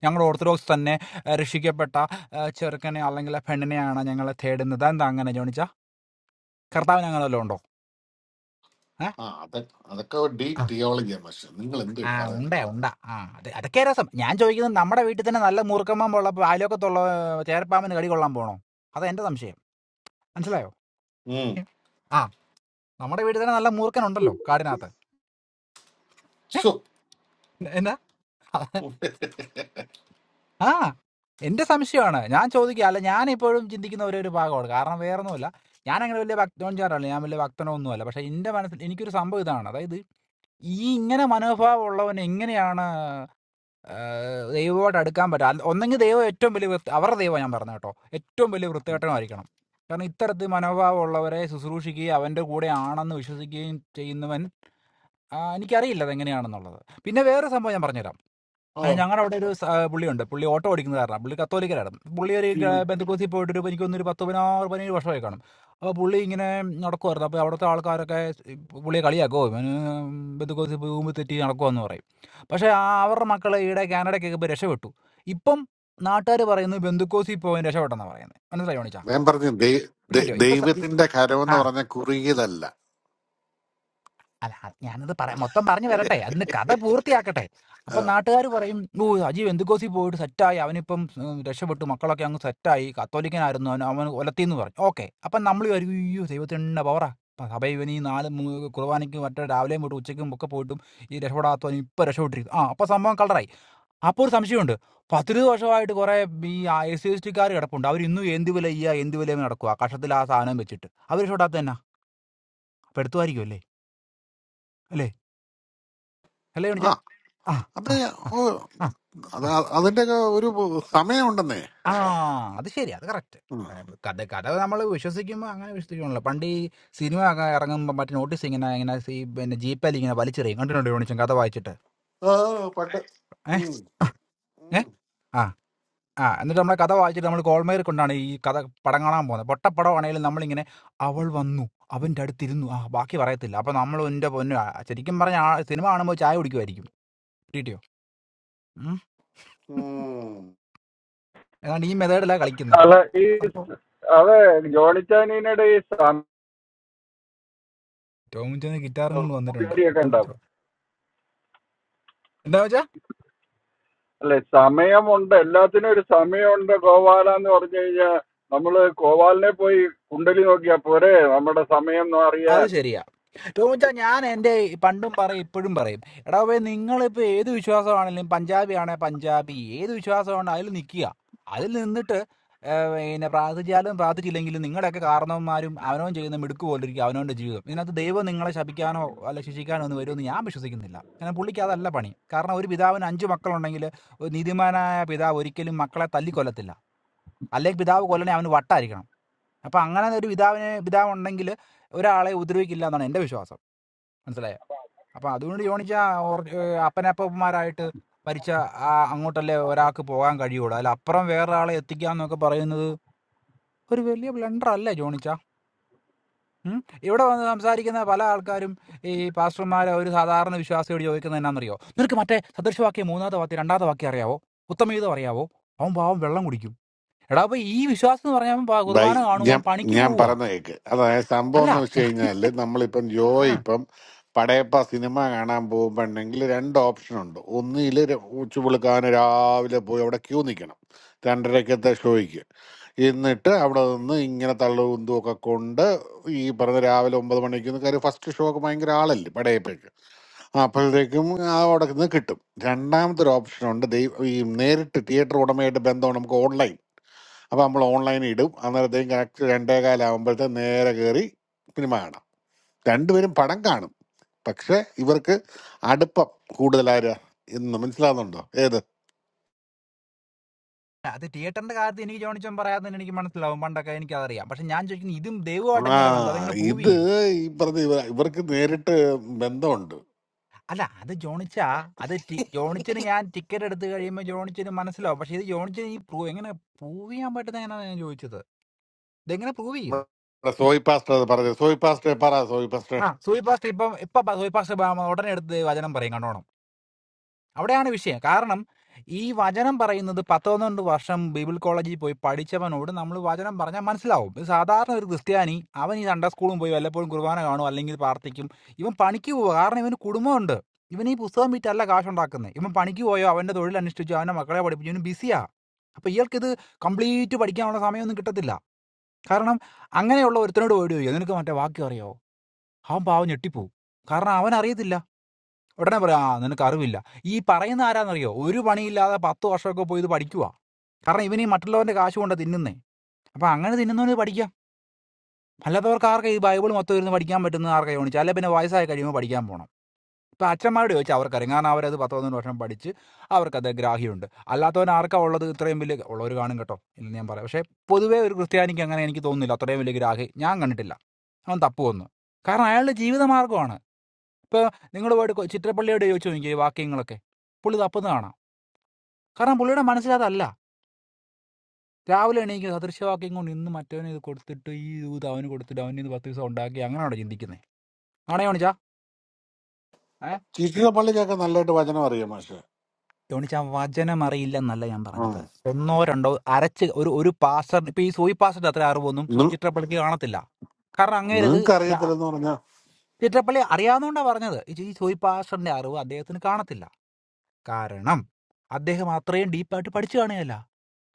Speaker 16: ഞങ്ങൾ ഓർത്തഡോക്സ് തന്നെ ഏഹ്, രക്ഷിക്കപ്പെട്ട ഏഹ്, ചെറുക്കനെ അല്ലെങ്കിൽ ആ പെണ്ണിനെയാണ് ഞങ്ങളെ തേടുന്നത് എന്താ അങ്ങനെ ജോണിച്ച കർത്താവ് ഞങ്ങളെല്ലാം ഉണ്ടോ
Speaker 11: ആ അതെ അതൊക്കെ ഡീ
Speaker 16: ഏഹ്
Speaker 11: തിയോളജിയാ പക്ഷെ നിങ്ങൾ എന്ത്
Speaker 16: ആ
Speaker 11: പറയുന്നു
Speaker 16: ഉണ്ട ഉണ്ട ആ അത് അതൊക്കെ രസം ഞാൻ ചോദിക്കുന്നത് നമ്മുടെ വീട്ടിൽ തന്നെ നല്ല മൂർക്കമ്മ ഉള്ളപ്പോൾ അയലോക്കത്തുള്ള ചേരപ്പാമ്പിന് കടി കൊള്ളാൻ പോണോ അതാ എന്റെ സംശയം മനസ്സിലായോ
Speaker 11: ഉം.
Speaker 16: ഉം. ആ നമ്മുടെ വീട്ടിൽ തന്നെ നല്ല മൂർക്കനുണ്ടല്ലോ കാടിനകത്ത് ഏ?
Speaker 11: ശ്ശോ.
Speaker 16: എന്നാ ആ എന്റെ സംശയമാണ് ഞാൻ ചോദിക്കുക അല്ല ഞാൻ ഇപ്പോഴും ചിന്തിക്കുന്ന ഒരേ ഒരു ഭാഗമാണ് കാരണം വേറെ ഒന്നുമില്ല ഞാൻ അങ്ങനെ വലിയ ഭക്തോഞ്ചാറല്ല ഞാൻ വലിയ ഭക്തനോ ഒന്നുമല്ല പക്ഷെ എന്റെ മനസ്സിൽ എനിക്കൊരു സംഭവം ഇതാണ് അതായത് ഈ ഇങ്ങനെ മനോഭാവം ഉള്ളവൻ എങ്ങനെയാണ് ആഹ് ദൈവമായിട്ട് അടുക്കാൻ പറ്റും ഒന്നെങ്കിൽ ദൈവം ഏറ്റവും വലിയ വൃത്തി അവരുടെ ദൈവം ഞാൻ പറഞ്ഞു കേട്ടോ ഏറ്റവും വലിയ വൃത്തികെട്ടനായിരിക്കണം കാരണം ഇത്തരത്തിൽ മനോഭാവമുള്ളവരെ ശുശ്രൂഷിക്കുകയും അവൻ്റെ കൂടെ ആണെന്ന് വിശ്വസിക്കുകയും ചെയ്യുന്നവൻ ആ, എനിക്കറിയില്ല അതെങ്ങനെയാണെന്നുള്ളത് പിന്നെ വേറെ സംഭവം ഞാൻ പറഞ്ഞുതരാം
Speaker 11: ആ.
Speaker 16: ഞങ്ങളുടെ അവിടെ ഒരു സ- ആ, പുള്ളിയുണ്ട് പുള്ളി ഓട്ടോ ഓടിക്കുന്ന കാരണം പുള്ളി കത്തോലിക്കലായിരുന്നു പുള്ളി ഒരു
Speaker 11: ഉം.
Speaker 16: ബന്ധുക്കൂസി പോയിട്ട് ഒരു എനിക്കൊന്ന് ഒരു പത്ത് പതിനാറ് പതിനേഴ് വർഷമായി കാണും അപ്പോൾ പുള്ളി ഇങ്ങനെ നടക്കുമായിരുന്നു അപ്പോൾ അവിടുത്തെ ആൾക്കാരൊക്കെ ഈ പുള്ളിയെ കളിയാക്കോ ഇവന് ബന്ധുക്കൂസി ഭൂമി തെറ്റി നടക്കുമെന്ന് പറയും പക്ഷേ ആ അവരുടെ മക്കൾ ഈടെ കാനഡയ്ക്കൊക്കെ ഇപ്പോൾ രക്ഷപ്പെട്ടു ഇപ്പം നാട്ടുകാർ പറയുന്നത് ബന്ധുക്കോസി പോകാൻ രക്ഷപ്പെട്ടെന്നാണ് പറയുന്നത് മനസ്സിലായി ഓണിച്ചാ
Speaker 11: ഞാൻ പറഞ്ഞു ദൈ-
Speaker 16: പിടി
Speaker 11: ദൈ-
Speaker 16: കിട്ടിയോ ഇപ്പം സ- ഈ-
Speaker 11: ദൈവത്തിന്റെ കരം എന്ന്
Speaker 16: ആ
Speaker 11: പറഞ്ഞ കുറിയതല്ല
Speaker 16: അല്ല അത് ഞാനത് പറയാം മൊത്തം പറഞ്ഞു വരട്ടെ അതിന് കഥ പൂർത്തിയാക്കട്ടെ
Speaker 11: ആ
Speaker 16: അപ്പം നാട്ടുകാർ പറയും ഓ അജീവ് എന്തുകോസി പോയിട്ട് സെറ്റായി അവനിപ്പം ഉം, രക്ഷപ്പെട്ടു മക്കളൊക്കെ അങ്ങ് സെറ്റായി കത്തോലിക്കനായിരുന്നു അവൻ അവൻ കൊലത്തിന്ന് പറഞ്ഞു ഓക്കെ അപ്പം നമ്മൾ വരും അയ്യോ ദൈവത്തിൻ്റെ പവറാ അപ്പം സഭ ഇവൻ ഈ നാല് മൂ- കുർബാനയ്ക്ക് മറ്റേ രാവിലെയും പോയിട്ട് ഉച്ചയ്ക്കും ഒക്കെ പോയിട്ടും ഈ രക്ഷപ്പെടാത്തവൻ ഇപ്പം രക്ഷപ്പെട്ടിരിക്കും ആ അപ്പം സംഭവം കളറായി അപ്പോൾ ഒരു സംശയമുണ്ട് പത്തിരുപത് വർഷമായിട്ട് കുറേ ഈ എസ് സി എസ് ടിക്കാർ കിടപ്പുണ്ട് അവർ ഇന്നും എന്ത് വില ചെയ്യുക എന്ത് വില നടക്കുക കഷത്തിൽ ആ സാധനം വെച്ചിട്ട് അവർ രക്ഷപ്പെടാത്ത തന്നെ അപ്പം എടുത്തുമായിരിക്കും അല്ലേ അല്ലേ അല്ലേ കാണിച്ച
Speaker 11: ആ,
Speaker 16: ആ,
Speaker 11: അത്
Speaker 16: ആ, ആ,
Speaker 11: ഓ,
Speaker 16: ആ,
Speaker 11: അത്
Speaker 16: ആ,
Speaker 11: അതിന്റെ ഒക്കെ ഒരു സമയമുണ്ടെന്നേ
Speaker 16: ആ, അത് ശരി അത് കറക്റ്റ്
Speaker 11: ഉം.
Speaker 16: കഥ കഥ നമ്മൾ വിശ്വസിക്കുമ്പോൾ അങ്ങനെ വിശ്വസിക്കണല്ലോ പണ്ട് ഈ സിനിമ ഒക്കെ ഇറങ്ങുമ്പോൾ മറ്റേ നോട്ടീസ് ഇങ്ങനെ ഇങ്ങനെ ഈ പിന്നെ ജീപ്പയിൽ ഇങ്ങനെ വലിച്ചെറിയും കണ്ടിട്ടുണ്ട് യോണിച്ചും കഥ വായിച്ചിട്ട്
Speaker 11: ആ പണ്ട്
Speaker 16: ഏ
Speaker 11: ഉം,
Speaker 16: ആ, ഏ
Speaker 11: ഉം,
Speaker 16: ആ ആ എന്നിട്ട് നമ്മളെ കഥ വായിച്ചിട്ട് നമ്മൾ കോൾമേർ കൊണ്ടാണ് ഈ കഥ പടം കാണാൻ പോകുന്നത് പൊട്ടപ്പടമാണെങ്കിലും നമ്മളിങ്ങനെ അവൾ വന്നു അവൻ്റെ അടുത്തിരുന്നു ആ ബാക്കി പറയത്തില്ല അപ്പം നമ്മൾ എൻ്റെ പൊന്നു ആ, ശരിക്കും പറഞ്ഞ ആ സിനിമ കാണുമ്പോൾ ചായ കുടിക്കുമായിരിക്കും കിട്ടിയോ ഉം.
Speaker 11: ഉം.
Speaker 16: ഏതാണ്ട് ഈ മെത്തേഡിലാണ് കളിക്കുന്നത്
Speaker 14: അല്ല
Speaker 16: കൊള്ളാം
Speaker 14: ഈ
Speaker 16: നല്ല സംഭവം
Speaker 14: അത് ജോണിച്ചാനിയുടെ ഈ സം-
Speaker 16: ടോമിച്ചാൻ ഗിറ്റാറും കൊണ്ട് വന്നിട്ടുണ്ട്
Speaker 14: പുകയറിയൊക്കെ ഉണ്ടാവും
Speaker 16: ടോമിച്ചോ എന്താ വെച്ചാ
Speaker 14: അല്ലെ സമയമുണ്ട് എല്ലാത്തിനും ഒരു സമയമുണ്ട് ഗോപാല എന്ന് പറഞ്ഞു കഴിഞ്ഞാൽ നമ്മള് ഗോപാലിനെ പോയി കുണ്ടലി നോക്കിയാ പോരെ നമ്മുടെ സമയം എന്ന്
Speaker 16: അത്
Speaker 14: അറിയാൻ
Speaker 16: ശരിയാ ടോമിച്ചാ ഞാൻ എൻ്റെ പണ്ടും പറയും ഇപ്പോഴും പറയും എടാ പോയി നിങ്ങളിപ്പോൾ ഏത് വിശ്വാസമാണെങ്കിലും പഞ്ചാബി ആണെ പഞ്ചാബി ഏത് വിശ്വാസമാണ് അതിൽ നിൽക്കുക അതിൽ നിന്നിട്ട് പിന്നെ പ്രാർത്ഥിച്ചാലും പ്രാർത്ഥിച്ചില്ലെങ്കിലും നിങ്ങളുടെയൊക്കെ കാരണവന്മാരും അവനവൻ ചെയ്യുന്ന മിടുക്ക് പോലിരിക്കും അവനവൻ്റെ ജീവിതം ഇതിനകത്ത് ദൈവം നിങ്ങളെ ശപിക്കാനോ അല്ല ശിക്ഷിക്കാനോ ഒന്നും വരുമെന്ന് ഞാൻ വിശ്വസിക്കുന്നില്ല കാരണം പുള്ളിക്ക് അതല്ല പണി കാരണം ഒരു പിതാവിന് അഞ്ച് മക്കളുണ്ടെങ്കിൽ ഒരു നീതിമാനായ പിതാവ് ഒരിക്കലും മക്കളെ തല്ലിക്കൊല്ലത്തില്ല അല്ലെങ്കിൽ പിതാവ് കൊല്ലണേ അവന് വട്ടായിരിക്കണം അപ്പം അങ്ങനെ ഒരു പിതാവിന് പിതാവുണ്ടെങ്കിൽ ഒരാളെ ഉപദ്രവിക്കില്ല എന്നാണ് എൻ്റെ വിശ്വാസം മനസ്സിലായോ അപ്പം അതുകൊണ്ട് യോണിച്ച അപ്പനപ്പന്മാരായിട്ട് മരിച്ച ആ അങ്ങോട്ടല്ലേ ഒരാൾക്ക് പോകാൻ കഴിയുള്ളൂ അല്ല അപ്പുറം വേറൊരാളെ എത്തിക്കാന്നൊക്കെ പറയുന്നത് ഒരു വലിയ ബ്ലണ്ടർ അല്ലേ ജോണിച്ച ഉം. ഇവിടെ വന്ന് സംസാരിക്കുന്ന പല ആൾക്കാരും ഈ പാസ്റ്റർമാരെ ഒരു സാധാരണ വിശ്വാസിയോട് ചോദിക്കുന്നത് എന്നാണെന്നറിയോ നിനക്ക് മറ്റേ സദൃശവാക്യം മൂന്നാമത്തെ വാക്യം രണ്ടാമത്തെ വാക്യം അറിയാവോ ഉത്തമീതം അറിയാവോ അവൻ പാവം വെള്ളം കുടിക്കും എടാ അപ്പൊ ഈ വിശ്വാസം എന്ന് പറഞ്ഞാൽ അവൻ പ-
Speaker 11: ബൈ
Speaker 16: കുർബാന കാണും
Speaker 11: ഞാൻ
Speaker 16: അവൻ പണിക്ക്
Speaker 11: ഞാൻ
Speaker 16: പോവുക
Speaker 11: പറഞ്ഞ കേക്ക് അതായത് സംഭവം എന്ന് വെച്ച്
Speaker 16: അല്ല
Speaker 11: കഴിഞ്ഞാല് നമ്മളിപ്പം ജോ ഇപ്പം പടയപ്പ സിനിമ കാണാൻ പോകുമ്പോണ്ടെങ്കിൽ രണ്ട് ഓപ്ഷൻ ഉണ്ട് ഒന്നിൽ ഉച്ചപുളുക്കാവിന് രാവിലെ പോയി അവിടെ ക്യൂ നിൽക്കണം രണ്ടരക്കത്തെ ഷോയ്ക്ക് എന്നിട്ട് അവിടെ നിന്ന് ഇങ്ങനെ തള്ളുന്തും ഒക്കെ കൊണ്ട് ഈ പറഞ്ഞ രാവിലെ ഒമ്പത് മണിക്ക് കാര്യം ഫസ്റ്റ് ഷോ ഒക്കെ ഭയങ്കര ആളല്ലേ പടയപ്പയ്ക്ക് അപ്പോഴത്തേക്കും ആ അവിടെ നിന്ന് കിട്ടും രണ്ടാമത്തെ ഒരു ഓപ്ഷൻ ഉണ്ട് ദൈവം ഈ നേരിട്ട് തിയേറ്റർ ഉടമയായിട്ട് ബന്ധമാണ് നമുക്ക് ഓൺലൈൻ അപ്പോൾ നമ്മൾ ഓൺലൈൻ ഇടും അന്നേരത്തേക്കും കറക്റ്റ് രണ്ടേ കാലാകുമ്പോഴത്തെ നേരെ കയറി സിനിമ കാണാം രണ്ടുപേരും പടം കാണും പക്ഷെ ഇവർക്ക് അടുപ്പം കൂടുതലാരാ എന്ന് മനസ്സിലാകുന്നുണ്ടോ ഏത്
Speaker 16: അത് തിയേറ്ററിന്റെ കാര്യത്തിൽ എനിക്ക് ജോണിച്ചോൻ പറയാതെ തന്നെ എനിക്ക് മനസ്സിലാവും പണ്ടൊക്കെ എനിക്ക് അതറിയാം പക്ഷെ ഞാൻ ചോദിക്കുന്നത് ഇതും ദൈവമായിട്ട്
Speaker 11: ആ
Speaker 16: എങ്ങനെ ബന്ധം അതെങ്ങനെ പ്രൂവ്
Speaker 11: ഇത്
Speaker 16: ചെയ്യും
Speaker 11: ഈ പറഞ്ഞ ഇവ ഇവർക്ക് നേരിട്ട് ബന്ധമുണ്ട്
Speaker 16: അല്ല അത് ജോണിച്ചാ അത് ടി- ജോണിച്ചിന് ഞാൻ ടിക്കറ്റ് എടുത്ത് കഴിയുമ്പോൾ ജോണിച്ചിന് മനസ്സിലാവും പക്ഷെ ഇത് ജോണിച്ചിന് ഈ പ്രൂവ് എങ്ങനെ പ്രൂവ് ചെയ്യാൻ പറ്റുന്ന എങ്ങനെ ഞാൻ ചോദിച്ചത് ഇതെങ്ങനെ പ്രൂവ് ചെയ്യും
Speaker 11: നമ്മുടെ സോയി പാസ്റ്റർ അത് പറഞ്ഞു സോയി പാസ്റ്റർ പറ സോയി പാസ്റ്റർ
Speaker 16: ആ സൂയിപാസ്റ്റ് ഇപ്പം ഇപ്പൊ സൂയിപാസ്റ്റ് ഉടനെ എടുത്ത് വചനം പറയും കണ്ടോണം അവിടെയാണ് വിഷയം കാരണം ഈ വചനം പറയുന്നത് പത്തൊന്നണ്ട് വർഷം ബൈബിൾ കോളേജിൽ പോയി പഠിച്ചവനോട് നമ്മൾ വചനം പറഞ്ഞാൽ മനസ്സിലാവും ഇത് സാധാരണ ഒരു ക്രിസ്ത്യാനി അവൻ ഈ സൺഡേ സ്കൂളും പോയി വല്ലപ്പോഴും കുർബാന കാണും അല്ലെങ്കിൽ പ്രാർത്ഥിക്കും ഇവൻ പണിക്ക് പോവുക കാരണം ഇവന് കുടുംബമുണ്ട് ഇവൻ ഈ പുസ്തകം വിറ്റല്ല കാശുണ്ടാക്കുന്നത് ഇവൻ പണിക്ക് പോയോ അവൻ്റെ തൊഴിൽ അനുഷ്ഠിച്ചോ അവൻ്റെ മക്കളെ പഠിപ്പിച്ചു ഇവന് ബിസിയാ അപ്പോൾ ഇയാൾക്കിത് കംപ്ലീറ്റ് പഠിക്കാനുള്ള സമയമൊന്നും കിട്ടത്തില്ല കാരണം അങ്ങനെയുള്ള ഒരുത്തനോട് പോയിട്ട് ചോദിക്കുക നിനക്ക് മറ്റേ വാക്യം അറിയോ അവൻ പാവം ഞെട്ടിപ്പോവും കാരണം അവൻ അറിയത്തില്ല ഉടനെ പറയാം ആ നിനക്ക് അറിവില്ല ഈ പറയുന്ന ആരാന്നറിയോ ഒരു പണിയില്ലാതെ പത്ത് വർഷമൊക്കെ പോയി ഇത് പഠിക്കുക കാരണം ഇവന് ഈ മറ്റുള്ളവന്റെ കാശ് കൊണ്ട് തിന്നുന്നേ അപ്പൊ അങ്ങനെ തിന്നുന്നവന് പഠിക്കാം അല്ലാത്തവർക്ക് ആർക്കാ ഈ ബൈബിൾ മൊത്തം ഇരുന്ന് പഠിക്കാൻ പറ്റുന്ന ആർക്കാ യോണിച്ചു അല്ലെ പിന്നെ വയസ്സായി കഴിയുമ്പോൾ പഠിക്കാൻ പോകണം ഇപ്പൊ അച്ഛന്മാരോട് ചോദിച്ചാൽ അവർക്കറിയാം കാരണം അവരത് പത്ത് പതിനൊന്ന് വർഷം പഠിച്ച് അവർക്കത് ഗ്രാഹ്യമുണ്ട് അല്ലാത്തവൻ ആർക്കാ ഉള്ളത് ഇത്രയും വലിയ ഉള്ളവർ കാണും കേട്ടോ എന്ന് ഞാൻ പറയാം പക്ഷേ പൊതുവേ ഒരു ക്രിസ്ത്യാനിക്ക് അങ്ങനെ എനിക്ക് തോന്നുന്നില്ല അത്രയും വലിയ ഗ്രാഹി ഞാൻ കണ്ടിട്ടില്ല അവൻ തപ്പു വന്നു കാരണം അയാളുടെ ജീവിത മാർഗ്ഗമാണ്. ഇപ്പോൾ നിങ്ങൾ പോയിട്ട് കൊ- ചിത്രപ്പള്ളിയോട് ചോദിച്ചു നോക്കിയാൽ ഈ വാക്യങ്ങളൊക്കെ പുള്ളി തപ്പുന്ന കാണാം കാരണം പുള്ളിയുടെ മനസ്സിലതല്ല രാവിലെ എണീക്കുക സദൃശവാക്യം കൊണ്ട് ഇന്ന് മറ്റവന് ഇത് കൊടുത്തിട്ട് ഈ ഇത് അവന് കൊടുത്തിട്ട് അവന് ഇത് പത്ത് ദിവസം ഉണ്ടാക്കി അങ്ങനെയാണോ ചിന്തിക്കുന്നത് ആണോ യോണിച്ചാ ഏ
Speaker 11: ചീച്ചിലപ്പള്ളിക്കൊക്കെ നല്ലതായിട്ട് വചനം അറിയാം മാഷെ
Speaker 16: യോണിച്ചാ വചനം അറിയില്ലെന്നല്ല ഞാൻ പറഞ്ഞത് ഒന്നോ രണ്ടോ അരച്ച് ഒരു ഒരു പാസ്റ്റർ ഇപ്പം ഈ സൂയി പാസ്റ്ററിന്റെ അത്ര അറിവൊന്നും സു- ചിത്രപ്പള്ളിക്ക് കാണത്തില്ല കാരണം അങ്ങേരത്
Speaker 11: നിങ്ങൾക്ക്
Speaker 16: യാ-
Speaker 11: അറിയത്തില്ലെന്ന് പറഞ്ഞ
Speaker 16: ചിത്രപ്പള്ളി അറിയാവുന്നതുകൊണ്ടാണ് പറഞ്ഞത് ഈ ഈ സൂയി പാസ്റ്ററിന്റെ അറിവ് അദ്ദേഹത്തിന് കാണത്തില്ല കാരണം അദ്ദേഹം അത്രയും ഡീപ്പായിട്ട് പഠിച്ചു കാണുകയല്ല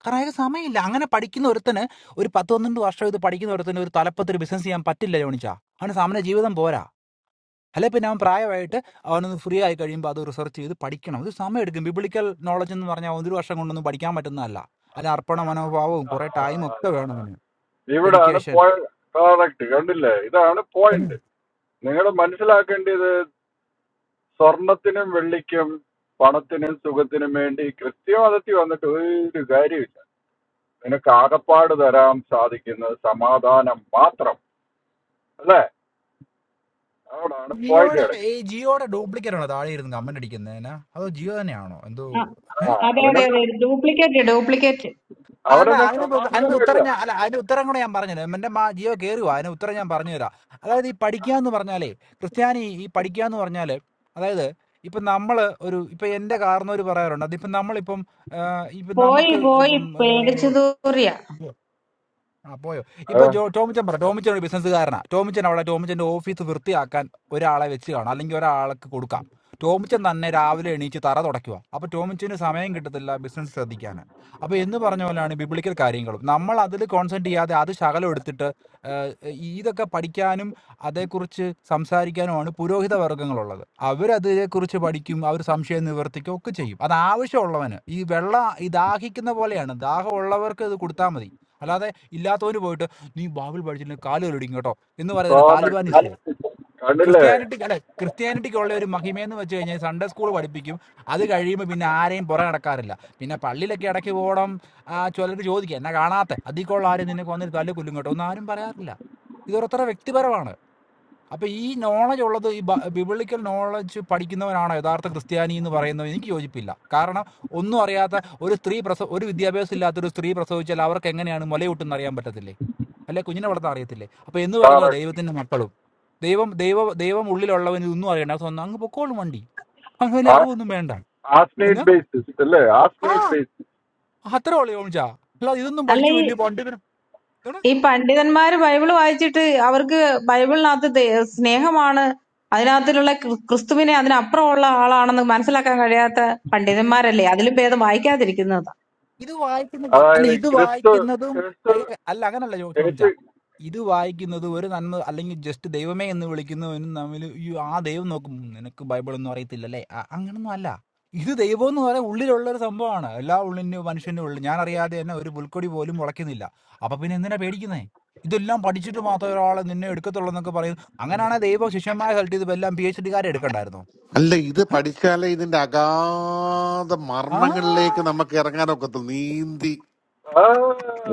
Speaker 16: കറായ സമയമില്ല അങ്ങനെ പഠിക്കുന്ന ഒരുത്തന് ഒരു പത്ത് പന്ത്രണ്ട് വർഷം ഇത് പഠിക്കുന്ന ഒരുത്തന് ഒരു തലപ്പത്ത് ഒരു ബിസിനസ് ചെയ്യാൻ പറ്റില്ല ജോണിച്ചാ അവന് സമയ ജീവിതം പോരാ അല്ലെ പിന്നെ അവൻ പ്രായമായിട്ട് അവനൊന്ന് ഫ്രീ ആയി കഴിയുമ്പോൾ അത് റിസർച്ച് ചെയ്ത് പഠിക്കണം ഇത് സമയം എടുക്കും ബിബിളിക്കൽ നോളജ് എന്ന് പറഞ്ഞാൽ ഒരു വർഷം കൊണ്ടൊന്നും പഠിക്കാൻ പറ്റുന്നതല്ല അല്ല അർപ്പണ മനോഭാവവും
Speaker 14: ആ,
Speaker 16: കുറെ ടൈം ഒക്കെ വേണം അതിന്
Speaker 14: ഇവിടാണ്
Speaker 16: ഡെഡിക്കേഷൻ
Speaker 14: പോയിന്റ്, കറക്റ്റ് കണ്ടില്ലേ ഇതാണ് പോയിന്റ് നിങ്ങൾ മനസ്സിലാക്കേണ്ടത് സ്വർണത്തിനും വെള്ളിക്കും പണത്തിനും സുഖത്തിനും വേണ്ടി കൃത്യമതത്തി വന്നിട്ട് ഒരു കാര്യമില്ല നിനക്ക് ആകപ്പാട് തരാൻ സാധിക്കുന്നത് സമാധാനം മാത്രം അല്ലേ അവിടാണ് പോയിന്റ്
Speaker 16: ജിയോടെ ഈ
Speaker 14: കിടക്കുന്നത്
Speaker 16: ജിയോടെ ഡ്യൂപ്ലിക്കേറ്റ് ആണോ താഴെ ഇരുന്ന് കമന്റ് അടിക്കുന്നതിന് അതോ ജിയോ തന്നെയാണോ എന്തോ
Speaker 13: ആ,
Speaker 14: ആ
Speaker 13: അതെ അതെ
Speaker 14: അവനത്
Speaker 13: അതെ ഡ്യൂപ്ലിക്കേറ്റ് ഡ്യൂപ്ലിക്കേറ്റ്
Speaker 16: അല്ല
Speaker 14: അവനെന്നെ
Speaker 16: അതിനൊക്കെ ഉത്ത- അതിനൊക്കെ
Speaker 14: സമാധാനമില്ല
Speaker 16: ഉത്തരം ഞാൻ അല്ല അതിന്റെ ഉത്തരം കൂടെ ഞാൻ പറഞ്ഞത് എന്റെ മാ ജിയോ കയറുക അതിന് ഉത്തരം ഞാൻ പറഞ്ഞു തരാം അതായത് ഈ പഠിക്കുക എന്ന് പറഞ്ഞാലേ ക്രിസ്ത്യാനി ഈ പഠിക്കുക എന്ന് പറഞ്ഞാല് അതായത് ഇപ്പൊ നമ്മള് ഒരു ഇപ്പൊ എന്റെ കാർന്നോര് പറയാറുണ്ട് അതിപ്പോ നമ്മളിപ്പം ആ, ഇപ്പൊ
Speaker 13: പോയി
Speaker 16: നമുക്ക്
Speaker 13: പോയി പേടിച്ചു
Speaker 16: ഇപ്പം
Speaker 13: തൂറിയ
Speaker 16: ആ പോയോ ഇപ്പൊ ജോ ടോമിച്ചൻ പറ ടോമിച്ചൻ ഒരു ബിസിനസ്സുകാരനാ ടോമിച്ചൻ അവിടെ ടോമിച്ചന്റെ ഓഫീസ് വൃത്തിയാക്കാൻ ഒരാളെ വെച്ച് കാണാം അല്ലെങ്കിൽ ഒരാൾക്ക് കൊടുക്കാം ടോമിച്ചൻ തന്നെ രാവിലെ എണീച്ച് തറ തുടയ്ക്കുക അപ്പൊ ടോമിച്ചന് സമയം കിട്ടത്തില്ല ബിസിനസ് ശ്രദ്ധിക്കാൻ അപ്പൊ എന്ന് പറഞ്ഞ പോലെയാണ് ബിബ്ലിക്കൽ കാര്യങ്ങളും നമ്മൾ അതിൽ കോൺസെൻട്രേറ്റ് ചെയ്യാതെ അത് ശകലം എടുത്തിട്ട് എ ഇതൊക്കെ പഠിക്കാനും അതേക്കുറിച്ച് സംസാരിക്കാനുമാണ് പുരോഹിത വർഗ്ഗങ്ങളുള്ളത്. അവരതിനെക്കുറിച്ച് പഠിക്കും, അവർ സംശയം നിവർത്തിക്കും ഒക്കെ ചെയ്യും. അത് ആവശ്യമുള്ളവന്. ഈ വെള്ളം ഈ ദാഹിക്കുന്ന പോലെയാണ്. ദാഹമുള്ളവർക്ക് ഇത് കൊടുത്താ മതി. അല്ലാതെ ഇല്ലാത്തവന് പോയിട്ട് "നീ ബൈബിൾ പഠിച്ചില്ലെങ്കിൽ കാല് കഴുകിയിടും കേട്ടോ" എന്ന് പറയുന്നത്
Speaker 14: പ്രോഡക്റ്റ്
Speaker 16: താലിബാനിസമേ.
Speaker 14: കണ്ടില്ലേ
Speaker 16: ക്രിസ്ത്യാനിറ്റി അല്ല ക്രിസ്ത്യാനിറ്റിക്കുള്ള ഒരു മഹിമയെന്ന് വെച്ച് കഴിഞ്ഞാൽ സൺഡേ സ്കൂൾ പഠിപ്പിക്കും. അത് കഴിയുമ്പോൾ പിന്നെ ആരെയും പുറകെ നടക്കാറില്ല. പിന്നെ പള്ളിയിലൊക്കെ ഇടയ്ക്ക് പോകണം. ആ ചിലർ ചോദിക്കും "എന്നാ കാണാത്തെ?" "അതിൽ കൊള്ള ആരും നിന്നെ കൊന്നിട്ട് തല്ലി കൊല്ലും കേട്ടോ" ഒന്നും ആരും പറയാറില്ല. ഇത് ഓരോരുത്തരുടെ വ്യക്തിപരമാണ് അപ്പൊ ഈ നോളജ് ഉള്ളത് ഈ ബിബിളിക്കൽ നോളജ് പഠിക്കുന്നവനാണ് യഥാർത്ഥ ക്രിസ്ത്യാനി എന്ന് പറയുന്നത് എനിക്ക് യോജിപ്പില്ല കാരണം ഒന്നും അറിയാത്ത ഒരു സ്ത്രീ പ്രസവ ഒരു വിദ്യാഭ്യാസം ഇല്ലാത്ത ഒരു സ്ത്രീ പ്രസവിച്ചാൽ അവർക്ക് എങ്ങനെയാണ് മുലയൂട്ടെന്ന് അറിയാൻ പറ്റത്തില്ലേ അല്ലെ കുഞ്ഞിനെ വളർത്താൻ അറിയത്തില്ലേ അപ്പൊ എന്ന് പറയുന്നത്
Speaker 14: പ്രോഡക്റ്റ്
Speaker 16: ദൈവത്തിന്റെ മക്കളും ദൈവം ദൈവ ദൈവം ഉള്ളിലുള്ളവന് ഇതൊന്നും അറിയണ്ട സ്വന്തം അങ്ങ് പൊക്കോളും വണ്ടി അവന് വലിയ അറിവൊന്നും വേണ്ട എന്നാ
Speaker 14: ആസ്നേറ്റ് ബേസിസ് അല്ലേ
Speaker 16: ആ
Speaker 14: ആസ്നേറ്റ് ബേസിസ്
Speaker 16: അത്ര ഉള്ളു ഓമിച്ചാ അല്ല ഇതൊന്നും
Speaker 13: അല്ല
Speaker 16: പഠിച്ചു
Speaker 13: ഈ
Speaker 16: വലിയ പണ്ട്
Speaker 13: ഈ പണ്ഡിതന്മാര് ബൈബിള് വായിച്ചിട്ട് അവർക്ക് ബൈബിളിനകത്ത് ദേ- സ്നേഹമാണ് അതിനകത്തിലുള്ള ക്രി- ക്രിസ്തുവിനെ അതിനപ്പുറമുള്ള ആളാണെന്ന് മനസ്സിലാക്കാൻ കഴിയാത്ത പണ്ഡിതന്മാരല്ലേ അതിലും ഭേദം വായിക്കാതിരിക്കുന്നതാ
Speaker 16: ഇത് വായിക്കുന്ന അല്ല
Speaker 14: അതായത്
Speaker 16: ഇത്
Speaker 14: ക്രിസ്തു
Speaker 16: വായിക്കുന്നതും
Speaker 14: ക്രിസ്തു
Speaker 16: അല്ല അല്ല, അങ്ങനല്ല ജോ- ജോണിച്ച
Speaker 14: യേശു
Speaker 16: ഇത് വായിക്കുന്നത് ഒരു നന്മ അല്ലെങ്കിൽ ജസ്റ്റ് ദൈവമേ എന്ന് വിളിക്കുന്നവനും തമ്മിൽ ഈ ആ ദൈവം നോക്കും "ഉം, നിനക്ക് ബൈബിൾ ഒന്നും അറിയത്തില്ലല്ലേ ആ, അങ്ങനൊന്നും അല്ല ഇത് ദൈവം എന്ന് പറയാൻ ഉള്ളിലുള്ള ഒരു സംഭവമാണ് എല്ലാ ഉള്ളിൻ്റെ മനുഷ്യൻ്റെ ഉള്ളിൽ ഞാൻ അറിയാതെ തന്നെ ഒരു പുൽക്കൊടി പോലും മുളയ്ക്കുന്നില്ല അപ്പൊ പിന്നെ എന്തിനാ പേടിക്കുന്നേ ഇതെല്ലാം പഠിച്ചിട്ട് മാത്രമേ ഒരാളെ നിന്നെ എടുക്കത്തുള്ളൂ എന്നൊക്കെ പറയുന്നു അങ്ങനെയാണെങ്കിൽ ദൈവം ശിഷ്യന്മാരെ സെലക്ട് ചെയ്തപ്പോൾ എല്ലാം പി എച്ച് ഡിക്കാരെ എടുക്കണ്ടായിരുന്നോ
Speaker 11: അല്ല ഇത്
Speaker 16: ഏ?
Speaker 11: പഠിച്ചാലേ ഇതിന്റെ അഗാധ മർമ്മങ്ങളിലേക്ക്
Speaker 16: ആ
Speaker 11: നമുക്ക് ഇറങ്ങാനൊക്കത്തുള്ളൂ നീന്തി
Speaker 14: ആ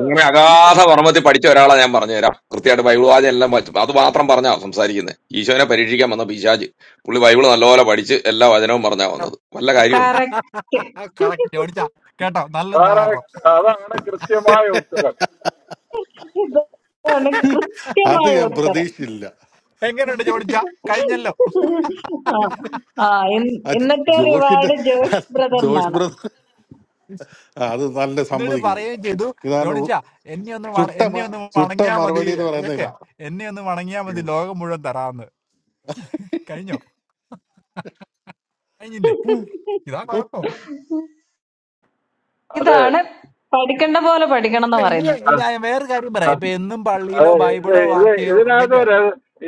Speaker 4: ഇങ്ങനെ അഗാധ
Speaker 14: അങ്ങനെ
Speaker 4: മർമ്മത്തിൽ പഠിച്ച ഒരാളെ ഞാൻ പറഞ്ഞുതരാം കൃത്യമായിട്ട് ബൈബിൾ വാചന എല്ലാം പഠിച്ചു അത് മാത്രം പറഞ്ഞാ സംസാരിക്കുന്നത് ഈശോനെ പരീക്ഷിക്കാൻ വന്ന പിശാജ് പുള്ളി ബൈബിൾ നല്ലപോലെ പഠിച്ച് എല്ലാ വചനവും പറഞ്ഞാ വന്നത് വല്ല കാര്യമുണ്ടോ
Speaker 13: കറക്റ്റ്
Speaker 16: കറക്റ്റ് ജോണിച്ച കേട്ടോ നല്ല ഉദാഹരണം
Speaker 14: correct. അതാണ് കൃത്യമായ ഉത്തരം
Speaker 13: ഇതാണ്
Speaker 11: അത്
Speaker 13: കൃത്യമായ
Speaker 11: ഞാൻ
Speaker 13: ഉത്തരം
Speaker 11: പ്രതീക്ഷിച്ചില്ല
Speaker 16: എങ്ങനെയുണ്ട് ജോണിച്ച കഴിഞ്ഞല്ലോ
Speaker 13: ആ ആ, ഇൻ-
Speaker 11: അത്
Speaker 13: ഇന്നത്തെ
Speaker 11: ജോഷിന്റെ
Speaker 13: റിവാർഡ് ജോഷ്
Speaker 11: ജോഷ്
Speaker 13: ബ്രദറിനാണ്
Speaker 11: ബ്രദർ അത് നല്ല
Speaker 16: എന്നിട്ട്
Speaker 11: സമ്മതിക്കുന്നത്
Speaker 16: പറയുകയും ചെയ്തു
Speaker 11: ഇതാണ്
Speaker 16: ജോണിച്ച
Speaker 11: ഉ-
Speaker 16: എന്നെ ഒന്ന് വണ-
Speaker 11: ചുട്ട
Speaker 16: എന്നെ
Speaker 11: മ-
Speaker 16: ഒന്ന്
Speaker 11: ചുട്ട
Speaker 16: വണങ്ങിയാ മതി
Speaker 11: മറുപടി എന്ന് പറയുന്ന
Speaker 16: ഏക്കെ
Speaker 11: ഇതാ
Speaker 16: എന്നെ ഒന്ന് വണങ്ങിയാ മതി
Speaker 11: ഉം.
Speaker 16: ലോകം മുഴുവൻ തരാന്ന് കഴിഞ്ഞോ കഴിഞ്ഞില്ലേ
Speaker 11: ഉം.
Speaker 16: ഇതാ
Speaker 11: ഓ,
Speaker 16: കുഴപ്പം
Speaker 13: ഇതാണ് പഠിക്കേണ്ട പോലെ പഠിക്കണം എന്ന്
Speaker 16: ഇല്ല, ഇനി
Speaker 13: പറയുന്നത്
Speaker 16: ഇതാ
Speaker 14: അതെ
Speaker 16: വേറൊരു കാര്യം പറയാം ഇപ്പൊ എന്നും
Speaker 14: അത്
Speaker 16: പള്ളിയിലോ
Speaker 14: ഇത്
Speaker 16: ബൈബിളോ
Speaker 14: ഇത്
Speaker 16: വാക്യോ
Speaker 14: ഇതിനകത്ത്
Speaker 16: കേക്ക്
Speaker 14: ര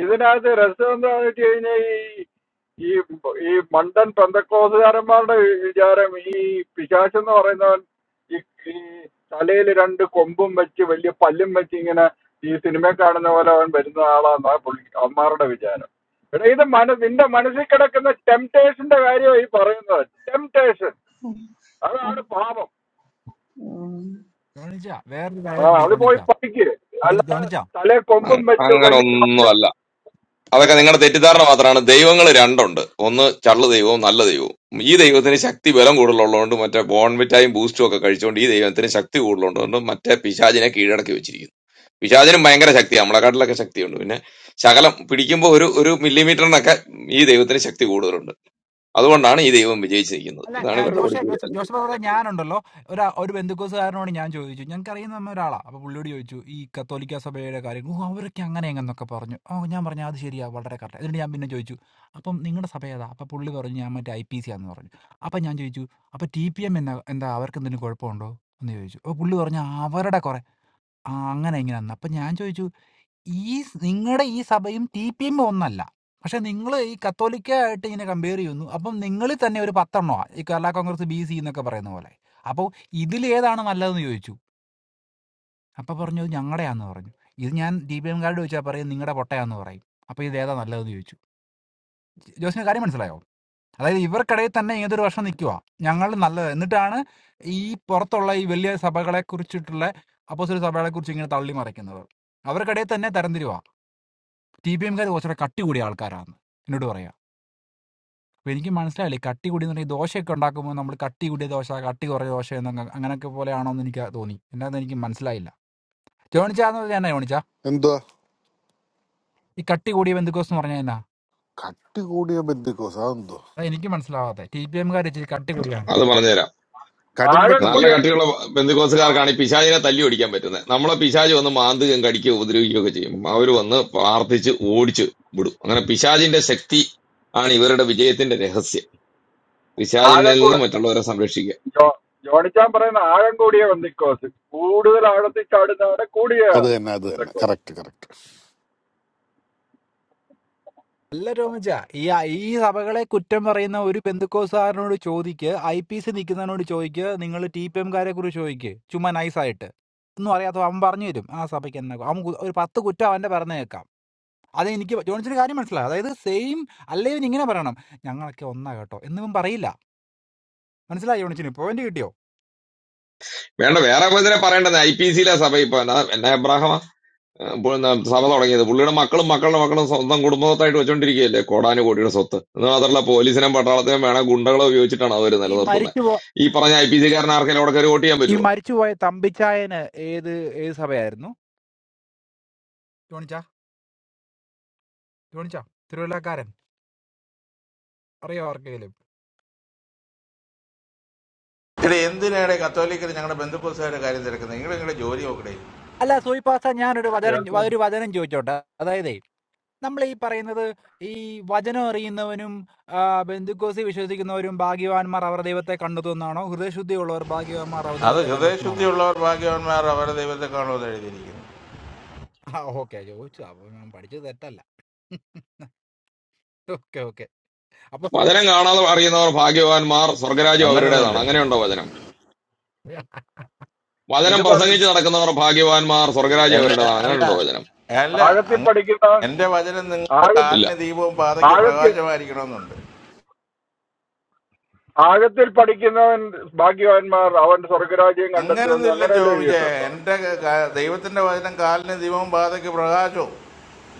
Speaker 14: ഇതിനകത്ത് രസം എന്താന്ന് വെച്ച് കഴിഞ്ഞാൽ ഈ ഈ ഈ മണ്ടൻ പെന്തക്കോസുകാരന്മാരുടെ വിചാരം ഈ പിശാചെന്ന് പറയുന്നവൻ ഈ ഈ തലയിൽ രണ്ട് കൊമ്പും വെച്ച് വലിയ പല്ലും വെച്ച് ഇങ്ങനെ ഈ സിനിമ കാണുന്ന പോലെ അവൻ വരുന്ന ആളാന്നാ പുള്ളി അമ്മാരുടെ വിചാരം എടാ ഇത് മന നിന്റെ മനസ്സിൽ കിടക്കുന്ന ടെംപ്ടേഷന്റെ കാര്യമാണ് ഈ പറയുന്നത് ടെംപ്ടേഷൻ അതാണ് പാപം
Speaker 13: ഉം.
Speaker 16: ജോണിച്ച വേറൊരു കാര്യം
Speaker 14: ആ
Speaker 16: ഉണ്ട്
Speaker 14: അത് പോയി പഠിക്ക് അല്ലാതെ
Speaker 16: ജോണിച്ച
Speaker 14: തലേ കൊമ്പും വെച്ച്
Speaker 4: അങ്ങനെ
Speaker 14: വലിയ
Speaker 4: ഒന്നും
Speaker 14: പല്ലും
Speaker 4: അല്ല അതൊക്കെ
Speaker 14: ആ.
Speaker 4: നിങ്ങളുടെ തെറ്റിദ്ധാരണ മാത്രമാണ് ദൈവങ്ങൾ രണ്ടുണ്ട് ഒന്ന് ചള്ളു ദൈവവും നല്ല ദൈവവും ഈ ദൈവത്തിന് ശക്തി ബലം കൂടുതലുള്ളതുകൊണ്ട് മറ്റേ ബോൺമിറ്റായും ബൂസ്റ്റും ഒക്കെ കഴിച്ചുകൊണ്ട് ഈ ദൈവത്തിന് ശക്തി കൂടുതലുള്ളതുകൊണ്ട് മറ്റേ പിശാചിനെ കീഴടക്കി വെച്ചിരിക്കുന്നു പിശാചിനും ഭയങ്കര ശക്തിയാണ് നമ്മളെക്കാട്ടിലൊക്കെ ശക്തിയുണ്ട് പിന്നെ ശകലം പിടിക്കുമ്പോൾ ഒരു ഒരു മില്ലിമീറ്ററിനൊക്കെ ഈ ദൈവത്തിന് ശക്തി കൂടുതലുണ്ട് അതുകൊണ്ടാണ് ഈ ദൈവം വിജയിച്ചിരിക്കുന്നത്
Speaker 16: അല്ല ആ,
Speaker 4: ഇതാണ് ഇവരുടെ
Speaker 16: ജോഷെ
Speaker 4: പഠിപ്പിക്കുക
Speaker 16: ജോസഫ് ജോസഫ് പറഞ്ഞ ഞാനുണ്ടല്ലോ ഒരു ഒരു ബന്ധുക്കോസുകാരനോട് ഞാൻ ചോദിച്ചു ഞങ്ങൾക്ക് അറിയുന്ന നമ്മ ഒരാളാണ് അപ്പോൾ പുള്ളിയോട് ചോദിച്ചു ഈ കത്തോലിക്ക സഭയുടെ കാര്യം ഓ അവരൊക്കെ അങ്ങനെ എങ്ങനെന്നൊക്കെ പറഞ്ഞു ഓ ഞാൻ പറഞ്ഞു അത് ശരിയാ വളരെ കറക്റ്റ് എന്നിട്ട് ഞാൻ പിന്നെ ചോദിച്ചു അപ്പം നിങ്ങളുടെ സഭ ഏതാ അപ്പം പുള്ളി പറഞ്ഞു ഞാൻ മറ്റേ ഐ പി സി ആന്ന് പറഞ്ഞു അപ്പം ഞാൻ ചോദിച്ചു അപ്പം ടി പി എം എന്നാ എന്താ അവർക്ക് എന്തെങ്കിലും കുഴപ്പമുണ്ടോ എന്ന് ചോദിച്ചു അപ്പോൾ പുള്ളി പറഞ്ഞു അവരുടെ കുറെ ആ അങ്ങനെ എങ്ങനെയാന്ന് അപ്പം ഞാൻ ചോദിച്ചു ഈ നിങ്ങളുടെ ഈ സഭയും ടി പി എം ഒന്നല്ല പക്ഷെ നിങ്ങൾ ഈ കത്തോലിക്ക ആയിട്ട് ഇങ്ങനെ കമ്പയർ ചെയ്യുന്നു അപ്പം നിങ്ങളിൽ തന്നെ ഒരു പത്തെണ്ണോ ഈ കേരള കോൺഗ്രസ് ബി സി എന്നൊക്കെ പറയുന്ന പോലെ അപ്പോൾ ഇതിൽ ഏതാണ് നല്ലതെന്ന് ചോദിച്ചു അപ്പോൾ പറഞ്ഞു "ഇത് ഞങ്ങളുടെയാന്ന് പറഞ്ഞു ഇത് ഞാൻ ടി പി എം കാർഡ് ചോദിച്ചാൽ പറയും നിങ്ങളുടെ പൊട്ടയാന്ന് പറയും അപ്പോൾ ഇത് ഏതാ നല്ലതെന്ന് ചോദിച്ചു ജോസിന് കാര്യം മനസ്സിലായോ അതായത് ഇവർക്കിടയിൽ തന്നെ ഇങ്ങനത്തെ ഒരു വർഷം നിൽക്കുക ഞങ്ങൾ നല്ലത് എന്നിട്ടാണ് ഈ പുറത്തുള്ള ഈ വലിയ സഭകളെ കുറിച്ചിട്ടുള്ള അപ്പോസിറ്റ് സഭകളെ കുറിച്ച് ഇങ്ങനെ തള്ളി മറിക്കുന്നത് അവർക്കിടയിൽ തന്നെ തരംതിരുവ ടി ബി എംകാർ കുറച്ചുകൂടെ കട്ടി കൂടിയ ആൾക്കാരാണ് എന്നോട് പറയാം അപ്പോൾ എനിക്ക് മനസ്സിലായില്ല ഈ കട്ടി കൂടി എന്ന് പറഞ്ഞാൽ ഈ ദോശയൊക്കെ ഉണ്ടാക്കുമ്പോൾ നമ്മൾ കട്ടി കൂടിയ ദോശ കട്ടി കുറേ ദോശ എന്നൊക്കെ അങ്ങനെയൊക്കെ പോലെയാണോ എന്ന് എനിക്ക് തോന്നി എന്നാന്ന് എനിക്ക് മനസ്സിലായില്ല ജോണിച്ചാന്ന് പറഞ്ഞാൽ എന്നാ ജോണിച്ച
Speaker 11: എന്തുവാ
Speaker 16: ഈ കട്ടി കൂടിയ ബന്ധുക്കോസ് എന്ന് പറഞ്ഞാൽ എന്നാ
Speaker 11: കട്ടി കൂടിയ ബന്ധുക്കോസ് അതെന്തോ
Speaker 16: അതാ എനിക്ക് മനസ്സിലാവാതെ ടി ബി എംകാർ ഇച്ചിരി കട്ടി കൂടിയാണ്
Speaker 4: അത് പറഞ്ഞുതരാം നല്ല
Speaker 14: ആഴംകൂടിയ
Speaker 11: കടുംപെട്ടെന്നുണ്ട്
Speaker 4: കട്ടിയുള്ള ബന്ധുക്കോസുകാർക്കാണ് ഈ പിശാചിനെ തല്ലി ഓടിക്കാൻ പറ്റുന്നത് നമ്മളെ പിശാജ് വന്ന് മാന്തുകയും കടിക്കുകയും ഉപദ്രവിക്കുകയും ഒക്കെ ചെയ്യും അവർ വന്ന് പ്രാർത്ഥിച്ച് ഓടിച്ച് വിടും അങ്ങനെ പിശാജിന്റെ ശക്തി ആണ് ഇവരുടെ വിജയത്തിന്റെ രഹസ്യം പിശാജിനിൽ നിന്ന്
Speaker 14: ആഴംകൂടി
Speaker 4: മറ്റുള്ളവരെ സംരക്ഷിക്കുക
Speaker 14: ജോ ജോണിച്ചാൻ പറയുന്ന ആഴംകൂടിയ ബന്ധക്കോസ് കൂടുതൽ ആഴത്തിൽ ചാടുന്നവരെ കൂടിയ
Speaker 11: അത് തന്നെ അത് തന്നെ
Speaker 14: ബന്ധക്കോസ്
Speaker 11: കറക്റ്റ് കറക്റ്റ്
Speaker 16: അല്ല രോമിച്ച ഈ ഈ സഭകളെ കുറ്റം പറയുന്ന ഒരു ബന്ധുക്കോസാരനോട് ചോദിക്ക് ഐ പി സി നിൽക്കുന്നതിനോട് ചോദിക്ക് നിങ്ങൾ ടി പി എംകാരെ കുറിച്ച് ചോദിക്ക് ചുമ്മാ നൈസായിട്ട് ഒന്നും അറിയാത്ത അവൻ പറഞ്ഞു തരും ആ സഭയ്ക്ക് എന്നാ അവൻ കു- ഒരു പത്ത് കുറ്റം അവൻ്റെ പറഞ്ഞു കേൾക്കാം അത് എനിക്ക് ജോണിച്ചൊരു കാര്യം മനസ്സിലായി അതായത് സെയിം അല്ലേ ഇവൻ ഇങ്ങനെ പറയണം ഞങ്ങളൊക്കെ ഒന്നാ കേട്ടോ എന്നിവൻ പറയില്ല മനസ്സിലായി ജോണിച്ചിന് പോയിന്റ് കിട്ടിയോ
Speaker 4: വേണ്ട വേറെ ഇതിനെ പറയേണ്ടത് ഐ പി സിയിലെ സഭ ഇപ്പൊ എന്നാ എന്നാ എബ്രാഹമാ ഏഹ് ഇപ്പോൾ എന്നാ സഭ തുടങ്ങിയത് പുള്ളിയുടെ മക്കളും മക്കളുടെ മക്കളും സ്വന്തം കുടുംബത്തായിട്ട് വെച്ചോണ്ടിരിക്കുകയല്ലേ കോടാനുകോടിയുടെ സ്വത്ത് എന്ന് മാത്രമല്ല പോലീസിനെയും പട്ടാളത്തെയും വേണം ഗുണ്ടകളെ ഉപയോഗിച്ചിട്ടാണ് അവർ
Speaker 16: ഈ
Speaker 4: നിലനിർത്തുന്നത്
Speaker 16: മരിച്ചു പോ
Speaker 4: ഈ പറഞ്ഞ ഐ പി സിക്കാരൻ ആർക്കെങ്കിലും അവിടെ കയറി വോട്ട് ചെയ്യാൻ
Speaker 16: ഈ
Speaker 4: പറ്റുമോ
Speaker 16: മരിച്ചുപോയ തമ്പിച്ചായന് ഏത് ഏത് സഭയായിരുന്നു ജോണിച്ചാ ജോണിച്ചാ തിരുവല്ലക്കാരൻ അറിയോ ആർക്കെങ്കിലും
Speaker 17: ഇവിടെ എന്തിനാണ് കത്തോലിക്കർ ഞങ്ങളുടെ ബന്ധുക്കോസുകാരുടെ കാര്യം തിരക്കുന്നത് നിങ്ങൾ നിങ്ങളുടെ ജോലി നോക്കണേ
Speaker 16: അല്ല സൂയിപ്പാസ ഞാനൊരു വചനം
Speaker 14: Yes.
Speaker 16: ഒരു വചനം ചോദിച്ചോട്ടെ അതായതേ നമ്മൾ ഈ പറയുന്നത് ഈ വചനം അറിയുന്നവനും ആ, ബന്ധുക്കോസി വിശ്വസിക്കുന്നവരും ഭാഗ്യവാന്മാർ അവർ ദൈവത്തെ കണ്ടെത്തുന്നതാണോ ഹൃദയശുദ്ധിയുള്ളവർ ഭാഗ്യവാന്മാർ അവർ
Speaker 17: അത്
Speaker 16: ദൈവത്തെ കണ്ടെത്തുന്നതാണോ
Speaker 17: ഹൃദയശുദ്ധിയുള്ളവർ ഭാഗ്യവാന്മാർ അവരുടെ ദൈവത്തെ കാണുമെന്ന് എഴുതിയിരിക്കുന്നു
Speaker 16: ആ ഓക്കെ ചോദിച്ചു അപ്പൊ ഞാൻ പഠിച്ചത് തെറ്റല്ല ഓക്കെ ഓക്കെ അപ്പൊ
Speaker 4: വചനം കാണാതെ അറിയുന്നവർ ഭാഗ്യവാന്മാർ സ്വർഗരാജ്യം അവരുടേതാണ്
Speaker 17: അങ്ങനൊന്നുമില്ല
Speaker 4: അങ്ങനെയുണ്ടോ വചനം വചനം
Speaker 14: ഇത് പറഞ്ഞു
Speaker 4: പ്രസംഗിച്ച് നടക്കുന്നവർ ഭാഗ്യവാന്മാർ സ്വർഗരാജ്യം
Speaker 17: എന്നെ-
Speaker 4: അവരുടേതാണ്
Speaker 17: അല്ല
Speaker 4: അങ്ങനെയുണ്ടോ വചനം
Speaker 17: അല്ല
Speaker 14: ആഴത്തിൽ
Speaker 17: അങ്ങനെയല്ല
Speaker 14: പഠിക്കുന്നവൻ
Speaker 17: എൻ്റെ വചനം നിങ്ങളുടെ
Speaker 14: ആഴത്തിൽ
Speaker 4: ഇല്ല
Speaker 17: കാലിന് ദീപവും പാതയ്ക്ക്
Speaker 14: ആഴത്തിൽ
Speaker 17: പ്രകാശമായിരിക്കണമെന്നുണ്ട്
Speaker 14: ആഴത്തിൽ പഠിക്കുന്നവൻ ഭാഗ്യവാന്മാർ അവൻ സ്വർഗരാജ്യം കണ്ടെത്തുമെന്ന്
Speaker 17: അങ്ങനൊന്നും ഇല്ല
Speaker 14: അങ്ങനെയല്ലേ
Speaker 17: ചോദിച്ചേ
Speaker 14: എഴുതിയിട്ടുണ്ടോ
Speaker 17: എൻ്റെ ക- ദൈവത്തിൻ്റെ വചനം കാലിന് ദീപവും പാതയ്ക്ക് പ്രകാശവും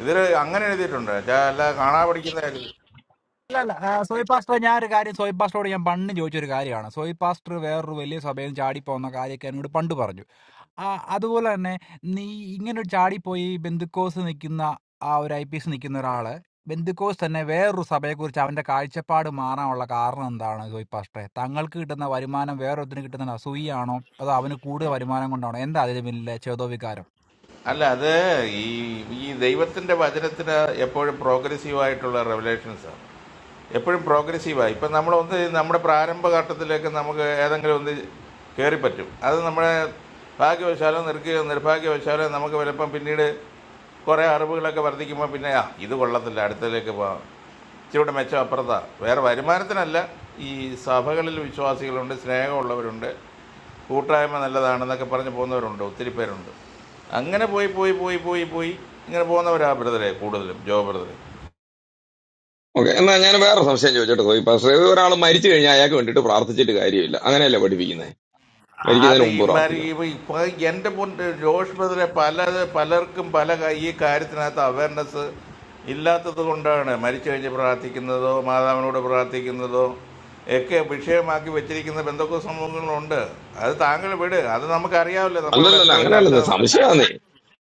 Speaker 17: ഇതിൽ അങ്ങനെ എഴുതിയിട്ടുണ്ട് ചാ- അല്ല കാണാ പഠിക്കുന്ന കാര്യം
Speaker 16: അല്ല അല്ല ആ, സോയി പാസ്റ്റർ ഞാൻ ഒരു കാര്യം സോയി പാസ്റ്ററോട് ഞാൻ പണ്ട് ചോദിച്ചൊരു കാര്യമാണ് സോയി പാസ്റ്റർ വേറൊരു വലിയ സഭയിൽ ചാടിപ്പോകുന്ന കാര്യമൊക്കെ എന്നോട് പണ്ട് പറഞ്ഞു ആ അതുപോലെ തന്നെ നീ ഇങ്ങനെ ഒരു ചാടിപ്പോയി ബന്ധുക്കോസ് നിൽക്കുന്ന ആ ഒരു ഐ പി എസ് നിൽക്കുന്ന ഒരാള് ബന്ധുക്കോസ് തന്നെ വേറൊരു സഭയെക്കുറിച്ച് അവന്റെ കാഴ്ചപ്പാട് മാറാനുള്ള കാരണം എന്താണ് സോയി പാസ്റ്ററെ തങ്ങൾക്ക് കിട്ടുന്ന വരുമാനം വേറൊരുത്തിന് കിട്ടുന്ന അസൂയാണോ അതോ അവന് കൂടുതൽ വരുമാനം കൊണ്ടാണോ എന്താ അതിന് പിന്നിലെ ചേതോ
Speaker 17: അല്ല അത് ഈ ഈ ദൈവത്തിന്റെ വചനത്തിന് എപ്പോഴും പ്രോഗ്രസീവ് ആയിട്ടുള്ള റെവലേഷൻസ് ആണ് എപ്പോഴും പ്രോഗ്രസീവാണ് ഇപ്പം നമ്മൾ ഒന്ന് നമ്മുടെ പ്രാരംഭഘട്ടത്തിലേക്ക് നമുക്ക് ഏതെങ്കിലും ഒന്ന് കയറി പറ്റും അത് നമ്മുടെ ഭാഗ്യവശാലോ നിർക്കുകയോ നിർഭാഗ്യവശാലോ നമുക്ക് വലപ്പം പിന്നീട് കുറേ അറിവുകളൊക്കെ വർദ്ധിക്കുമ്പോൾ പിന്നെ ആ ഇത് കൊള്ളത്തില്ല അടുത്തതിലേക്ക് പോകാം ഇച്ചിരൂടെ മെച്ചം അപ്പുറത്താ വേറെ വരുമാനത്തിനല്ല ഈ സഭകളിൽ വിശ്വാസികളുണ്ട് സ്നേഹമുള്ളവരുണ്ട് കൂട്ടായ്മ നല്ലതാണെന്നൊക്കെ പറഞ്ഞ് പോകുന്നവരുണ്ട് ഒത്തിരി പേരുണ്ട് അങ്ങനെ പോയി പോയി പോയി പോയി പോയി ഇങ്ങനെ പോകുന്നവരാ ബ്രദറെ കൂടുതലും ജോ ബ്രദറെ
Speaker 4: ഓക്കെ എന്നാ ഞാൻ വേറെ സംശയം ചോദിച്ചോട്ടെ സോയി പക്ഷേ ഒരാൾ മരിച്ചു കഴിഞ്ഞാൽ അയാൾക്ക് വേണ്ടിയിട്ട് പ്രാർത്ഥിച്ചിട്ട് കാര്യമില്ല അങ്ങനെയല്ലേ പഠിപ്പിക്കുന്നത്
Speaker 17: അത്
Speaker 4: മരിക്കുന്നതിന്
Speaker 17: ഈ
Speaker 4: മുമ്പ്
Speaker 17: മാതിരി
Speaker 4: പ്രാർത്ഥിക്കണം
Speaker 17: ഇപ്പൊ എന്റെ മുൻ ജോഷ് ബ്രദറെ പല പലർക്കും പല ക- ഈ കാര്യത്തിനകത്ത് അവയർനെസ് ഇല്ലാത്തത് കൊണ്ടാണ് മരിച്ചു കഴിഞ്ഞ് പ്രാർത്ഥിക്കുന്നതോ മാതാവിനോട് പ്രാർത്ഥിക്കുന്നതോ ഒക്കെ വിഷയമാക്കി വെച്ചിരിക്കുന്ന ബന്ധുക്ക സംഭവങ്ങളുണ്ട് അത് താങ്കൾ വിട് അത് നമുക്കറിയാവില്ല നമ്മളിവിടെ
Speaker 4: അല്ലല്ലല്ല
Speaker 17: എത്രയോ ചർച്ച
Speaker 4: അങ്ങനെയല്ലെന്ന്
Speaker 17: നടത്തി.
Speaker 4: സംശയമാന്നേ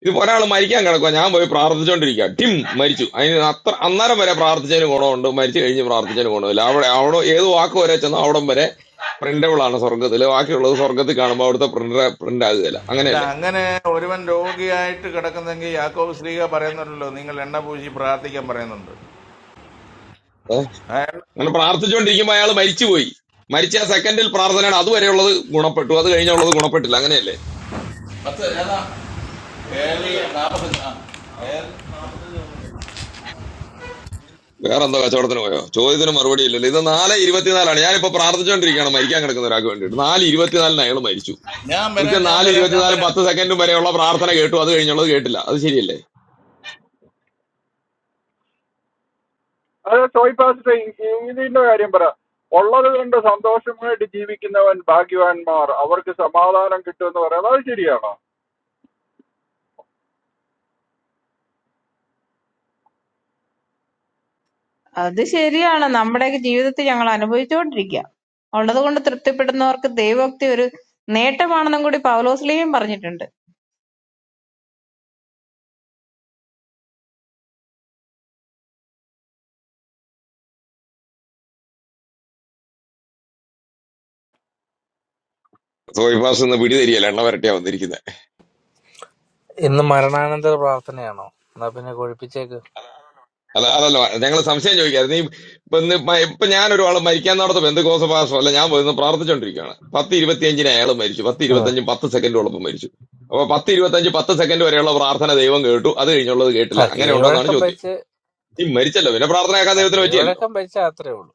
Speaker 4: ഇതിപ്പോ ഒരാൾ മരിക്കാൻ കിടക്കുക ഞാൻ പോയി പ്രാർത്ഥിച്ചുകൊണ്ടിരിക്കുക ടിം മരിച്ചു അതിന് അത്ര അന്നേരം വരെ പ്രാർത്ഥിച്ചതിന് ഗുണമുണ്ട് മരിച്ചു കഴിഞ്ഞ് പ്രാർത്ഥിച്ചതിന് ഗുണമില്ല അവിടെ അവിടെ ഏത് വാക്ക് വരെ ചെന്നോ അവിടെ വരെ പ്രിന്റബിൾ ആണ് സ്വർഗത്തില് ബാക്കിയുള്ളത് സ്വർഗത്തിൽ കാണുമ്പോൾ അവിടുത്തെ പ്രിന്റർ പ്രിന്റ് ആകുകയില്ല
Speaker 17: അല്ല
Speaker 4: അങ്ങനെയല്ലേ
Speaker 17: അങ്ങനെ ഒരുവൻ രോഗിയായിട്ട് കിടക്കുന്നെങ്കിൽ യാക്കോബ് ശ്രീക പറയുന്നുണ്ടല്ലോ നിങ്ങൾ എണ്ണ പൂശി പ്രാർത്ഥിക്കാൻ പറയുന്നുണ്ട്
Speaker 4: ഏ?
Speaker 17: അയാൾ
Speaker 4: അങ്ങനെ പ്രാർത്ഥിച്ചുകൊണ്ടിരിക്കുമ്പോൾ അയാൾ മരിച്ചുപോയി മരിച്ച ആ സെക്കൻഡിൽ പ്രാർത്ഥനയാണ് അതുവരെയുള്ളത് ഗുണപ്പെട്ടു അത് കഴിഞ്ഞുള്ളത് ഗുണപ്പെട്ടില്ല അങ്ങനെയല്ലേ
Speaker 17: പത്ത് ഏതാ ഏഴ് നാപ്പത്തഞ്ച് ആ ഏഴ്
Speaker 4: വേറെ എന്തോ കച്ചവടത്തിന് പോയോ ചോദ്യത്തിന് മറുപടി ഇല്ലല്ലോ ഇത് നാല് ഇരുപത്തിനാലാണ് ഞാനിപ്പോ പ്രാർത്ഥിച്ചുകൊണ്ടിരിക്കുകയാണ് മരിക്കാൻ കിടക്കുന്ന ഒരാൾക്ക് വേണ്ടിയിട്ട് നാല് ഇരുപത്തിനാലിന് അയാൾ മരിച്ചു
Speaker 17: ഞാൻ വരാം
Speaker 4: കൃത്യം
Speaker 17: ഞാൻ
Speaker 4: നാല്
Speaker 17: വരാം ഞാൻ
Speaker 4: ഇരുപത്തിനാലും
Speaker 17: വരാം
Speaker 4: പത്ത് സെക്കൻഡും വരെയുള്ള പ്രാർത്ഥന കേട്ടു അത് കഴിഞ്ഞുള്ളത് കേട്ടില്ല അത് ശരിയല്ലേ
Speaker 14: അത് സോയി പാസ്റ്റ് ഇതിന്റെ കാര്യം പറ ഉള്ളത് കൊണ്ട് സന്തോഷമായിട്ട് ജീവിക്കുന്നവൻ ഭാഗ്യവാന്മാർ അവർക്ക് സമാധാനം കിട്ടുമെന്ന് പറയുന്നത് അത് ശരിയാണോ
Speaker 13: അത് ശരിയാണ്. നമ്മുടെയൊക്കെ ജീവിതത്തിൽ ഞങ്ങൾ അനുഭവിച്ചുകൊണ്ടിരിക്കുക. ഉള്ളതുകൊണ്ട് തൃപ്തിപ്പെടുന്നവർക്ക് ദൈവോക്തി ഒരു നേട്ടമാണെന്നും കൂടി പൗലോസ്ലീഹയും പറഞ്ഞിട്ടുണ്ട്.
Speaker 4: സോയിഫാസ് ഇന്ന് പിടി തരികയല്ല എണ്ണ വരട്ടിയാ വന്നിരിക്കുന്നത്
Speaker 18: ഇന്ന് മരണാനന്തര പ്രാർത്ഥനയാണോ എന്നാ പിന്നെ കൊഴിപ്പിച്ചേക്ക്
Speaker 4: അല്ല അതല്ല ഞങ്ങൾ സംശയം ചോദിക്കായിരുന്നു ഈ ഇപ്പൊ ഇന്ന് മ- ഇപ്പൊ ഞാനൊരാൾ മരിക്കാൻ നടത്ത് ബന്ധുക്കോസ പാസ്റ്റർ അല്ല ഞാൻ പോയിരുന്നു പ്രാർത്ഥിച്ചോണ്ടിരിക്കുകയാണ് പത്ത് ഇരുപത്തിയഞ്ചിന് അയാൾ മരിച്ചു പത്ത്
Speaker 18: ഉം.
Speaker 4: ഇരുപത്തഞ്ചും പത്ത് സെക്കൻഡോളപ്പം മരിച്ചു അപ്പൊ പത്ത് ഇരുപത്തഞ്ച് പത്ത് സെക്കൻഡ് വരെയുള്ള പ്രാർത്ഥന ദൈവം കേട്ടു അത് കഴിഞ്ഞുള്ളത്
Speaker 18: ആ
Speaker 4: കേട്ടില്ല അങ്ങനെ ഉണ്ടോ എന്നാണ്
Speaker 18: കീഴ്വഴക്കം
Speaker 4: ചോദ്യം
Speaker 18: വെച്ച്
Speaker 4: ഈ മരിച്ചല്ലോ പിന്നെ പ്രാർത്ഥനയാക്കാൻ
Speaker 18: ആ
Speaker 4: ദൈവത്തിന് പറ്റിയല്ലോ
Speaker 18: കീഴ്വഴക്കം വെച്ച അത്രേ ഉള്ളൂ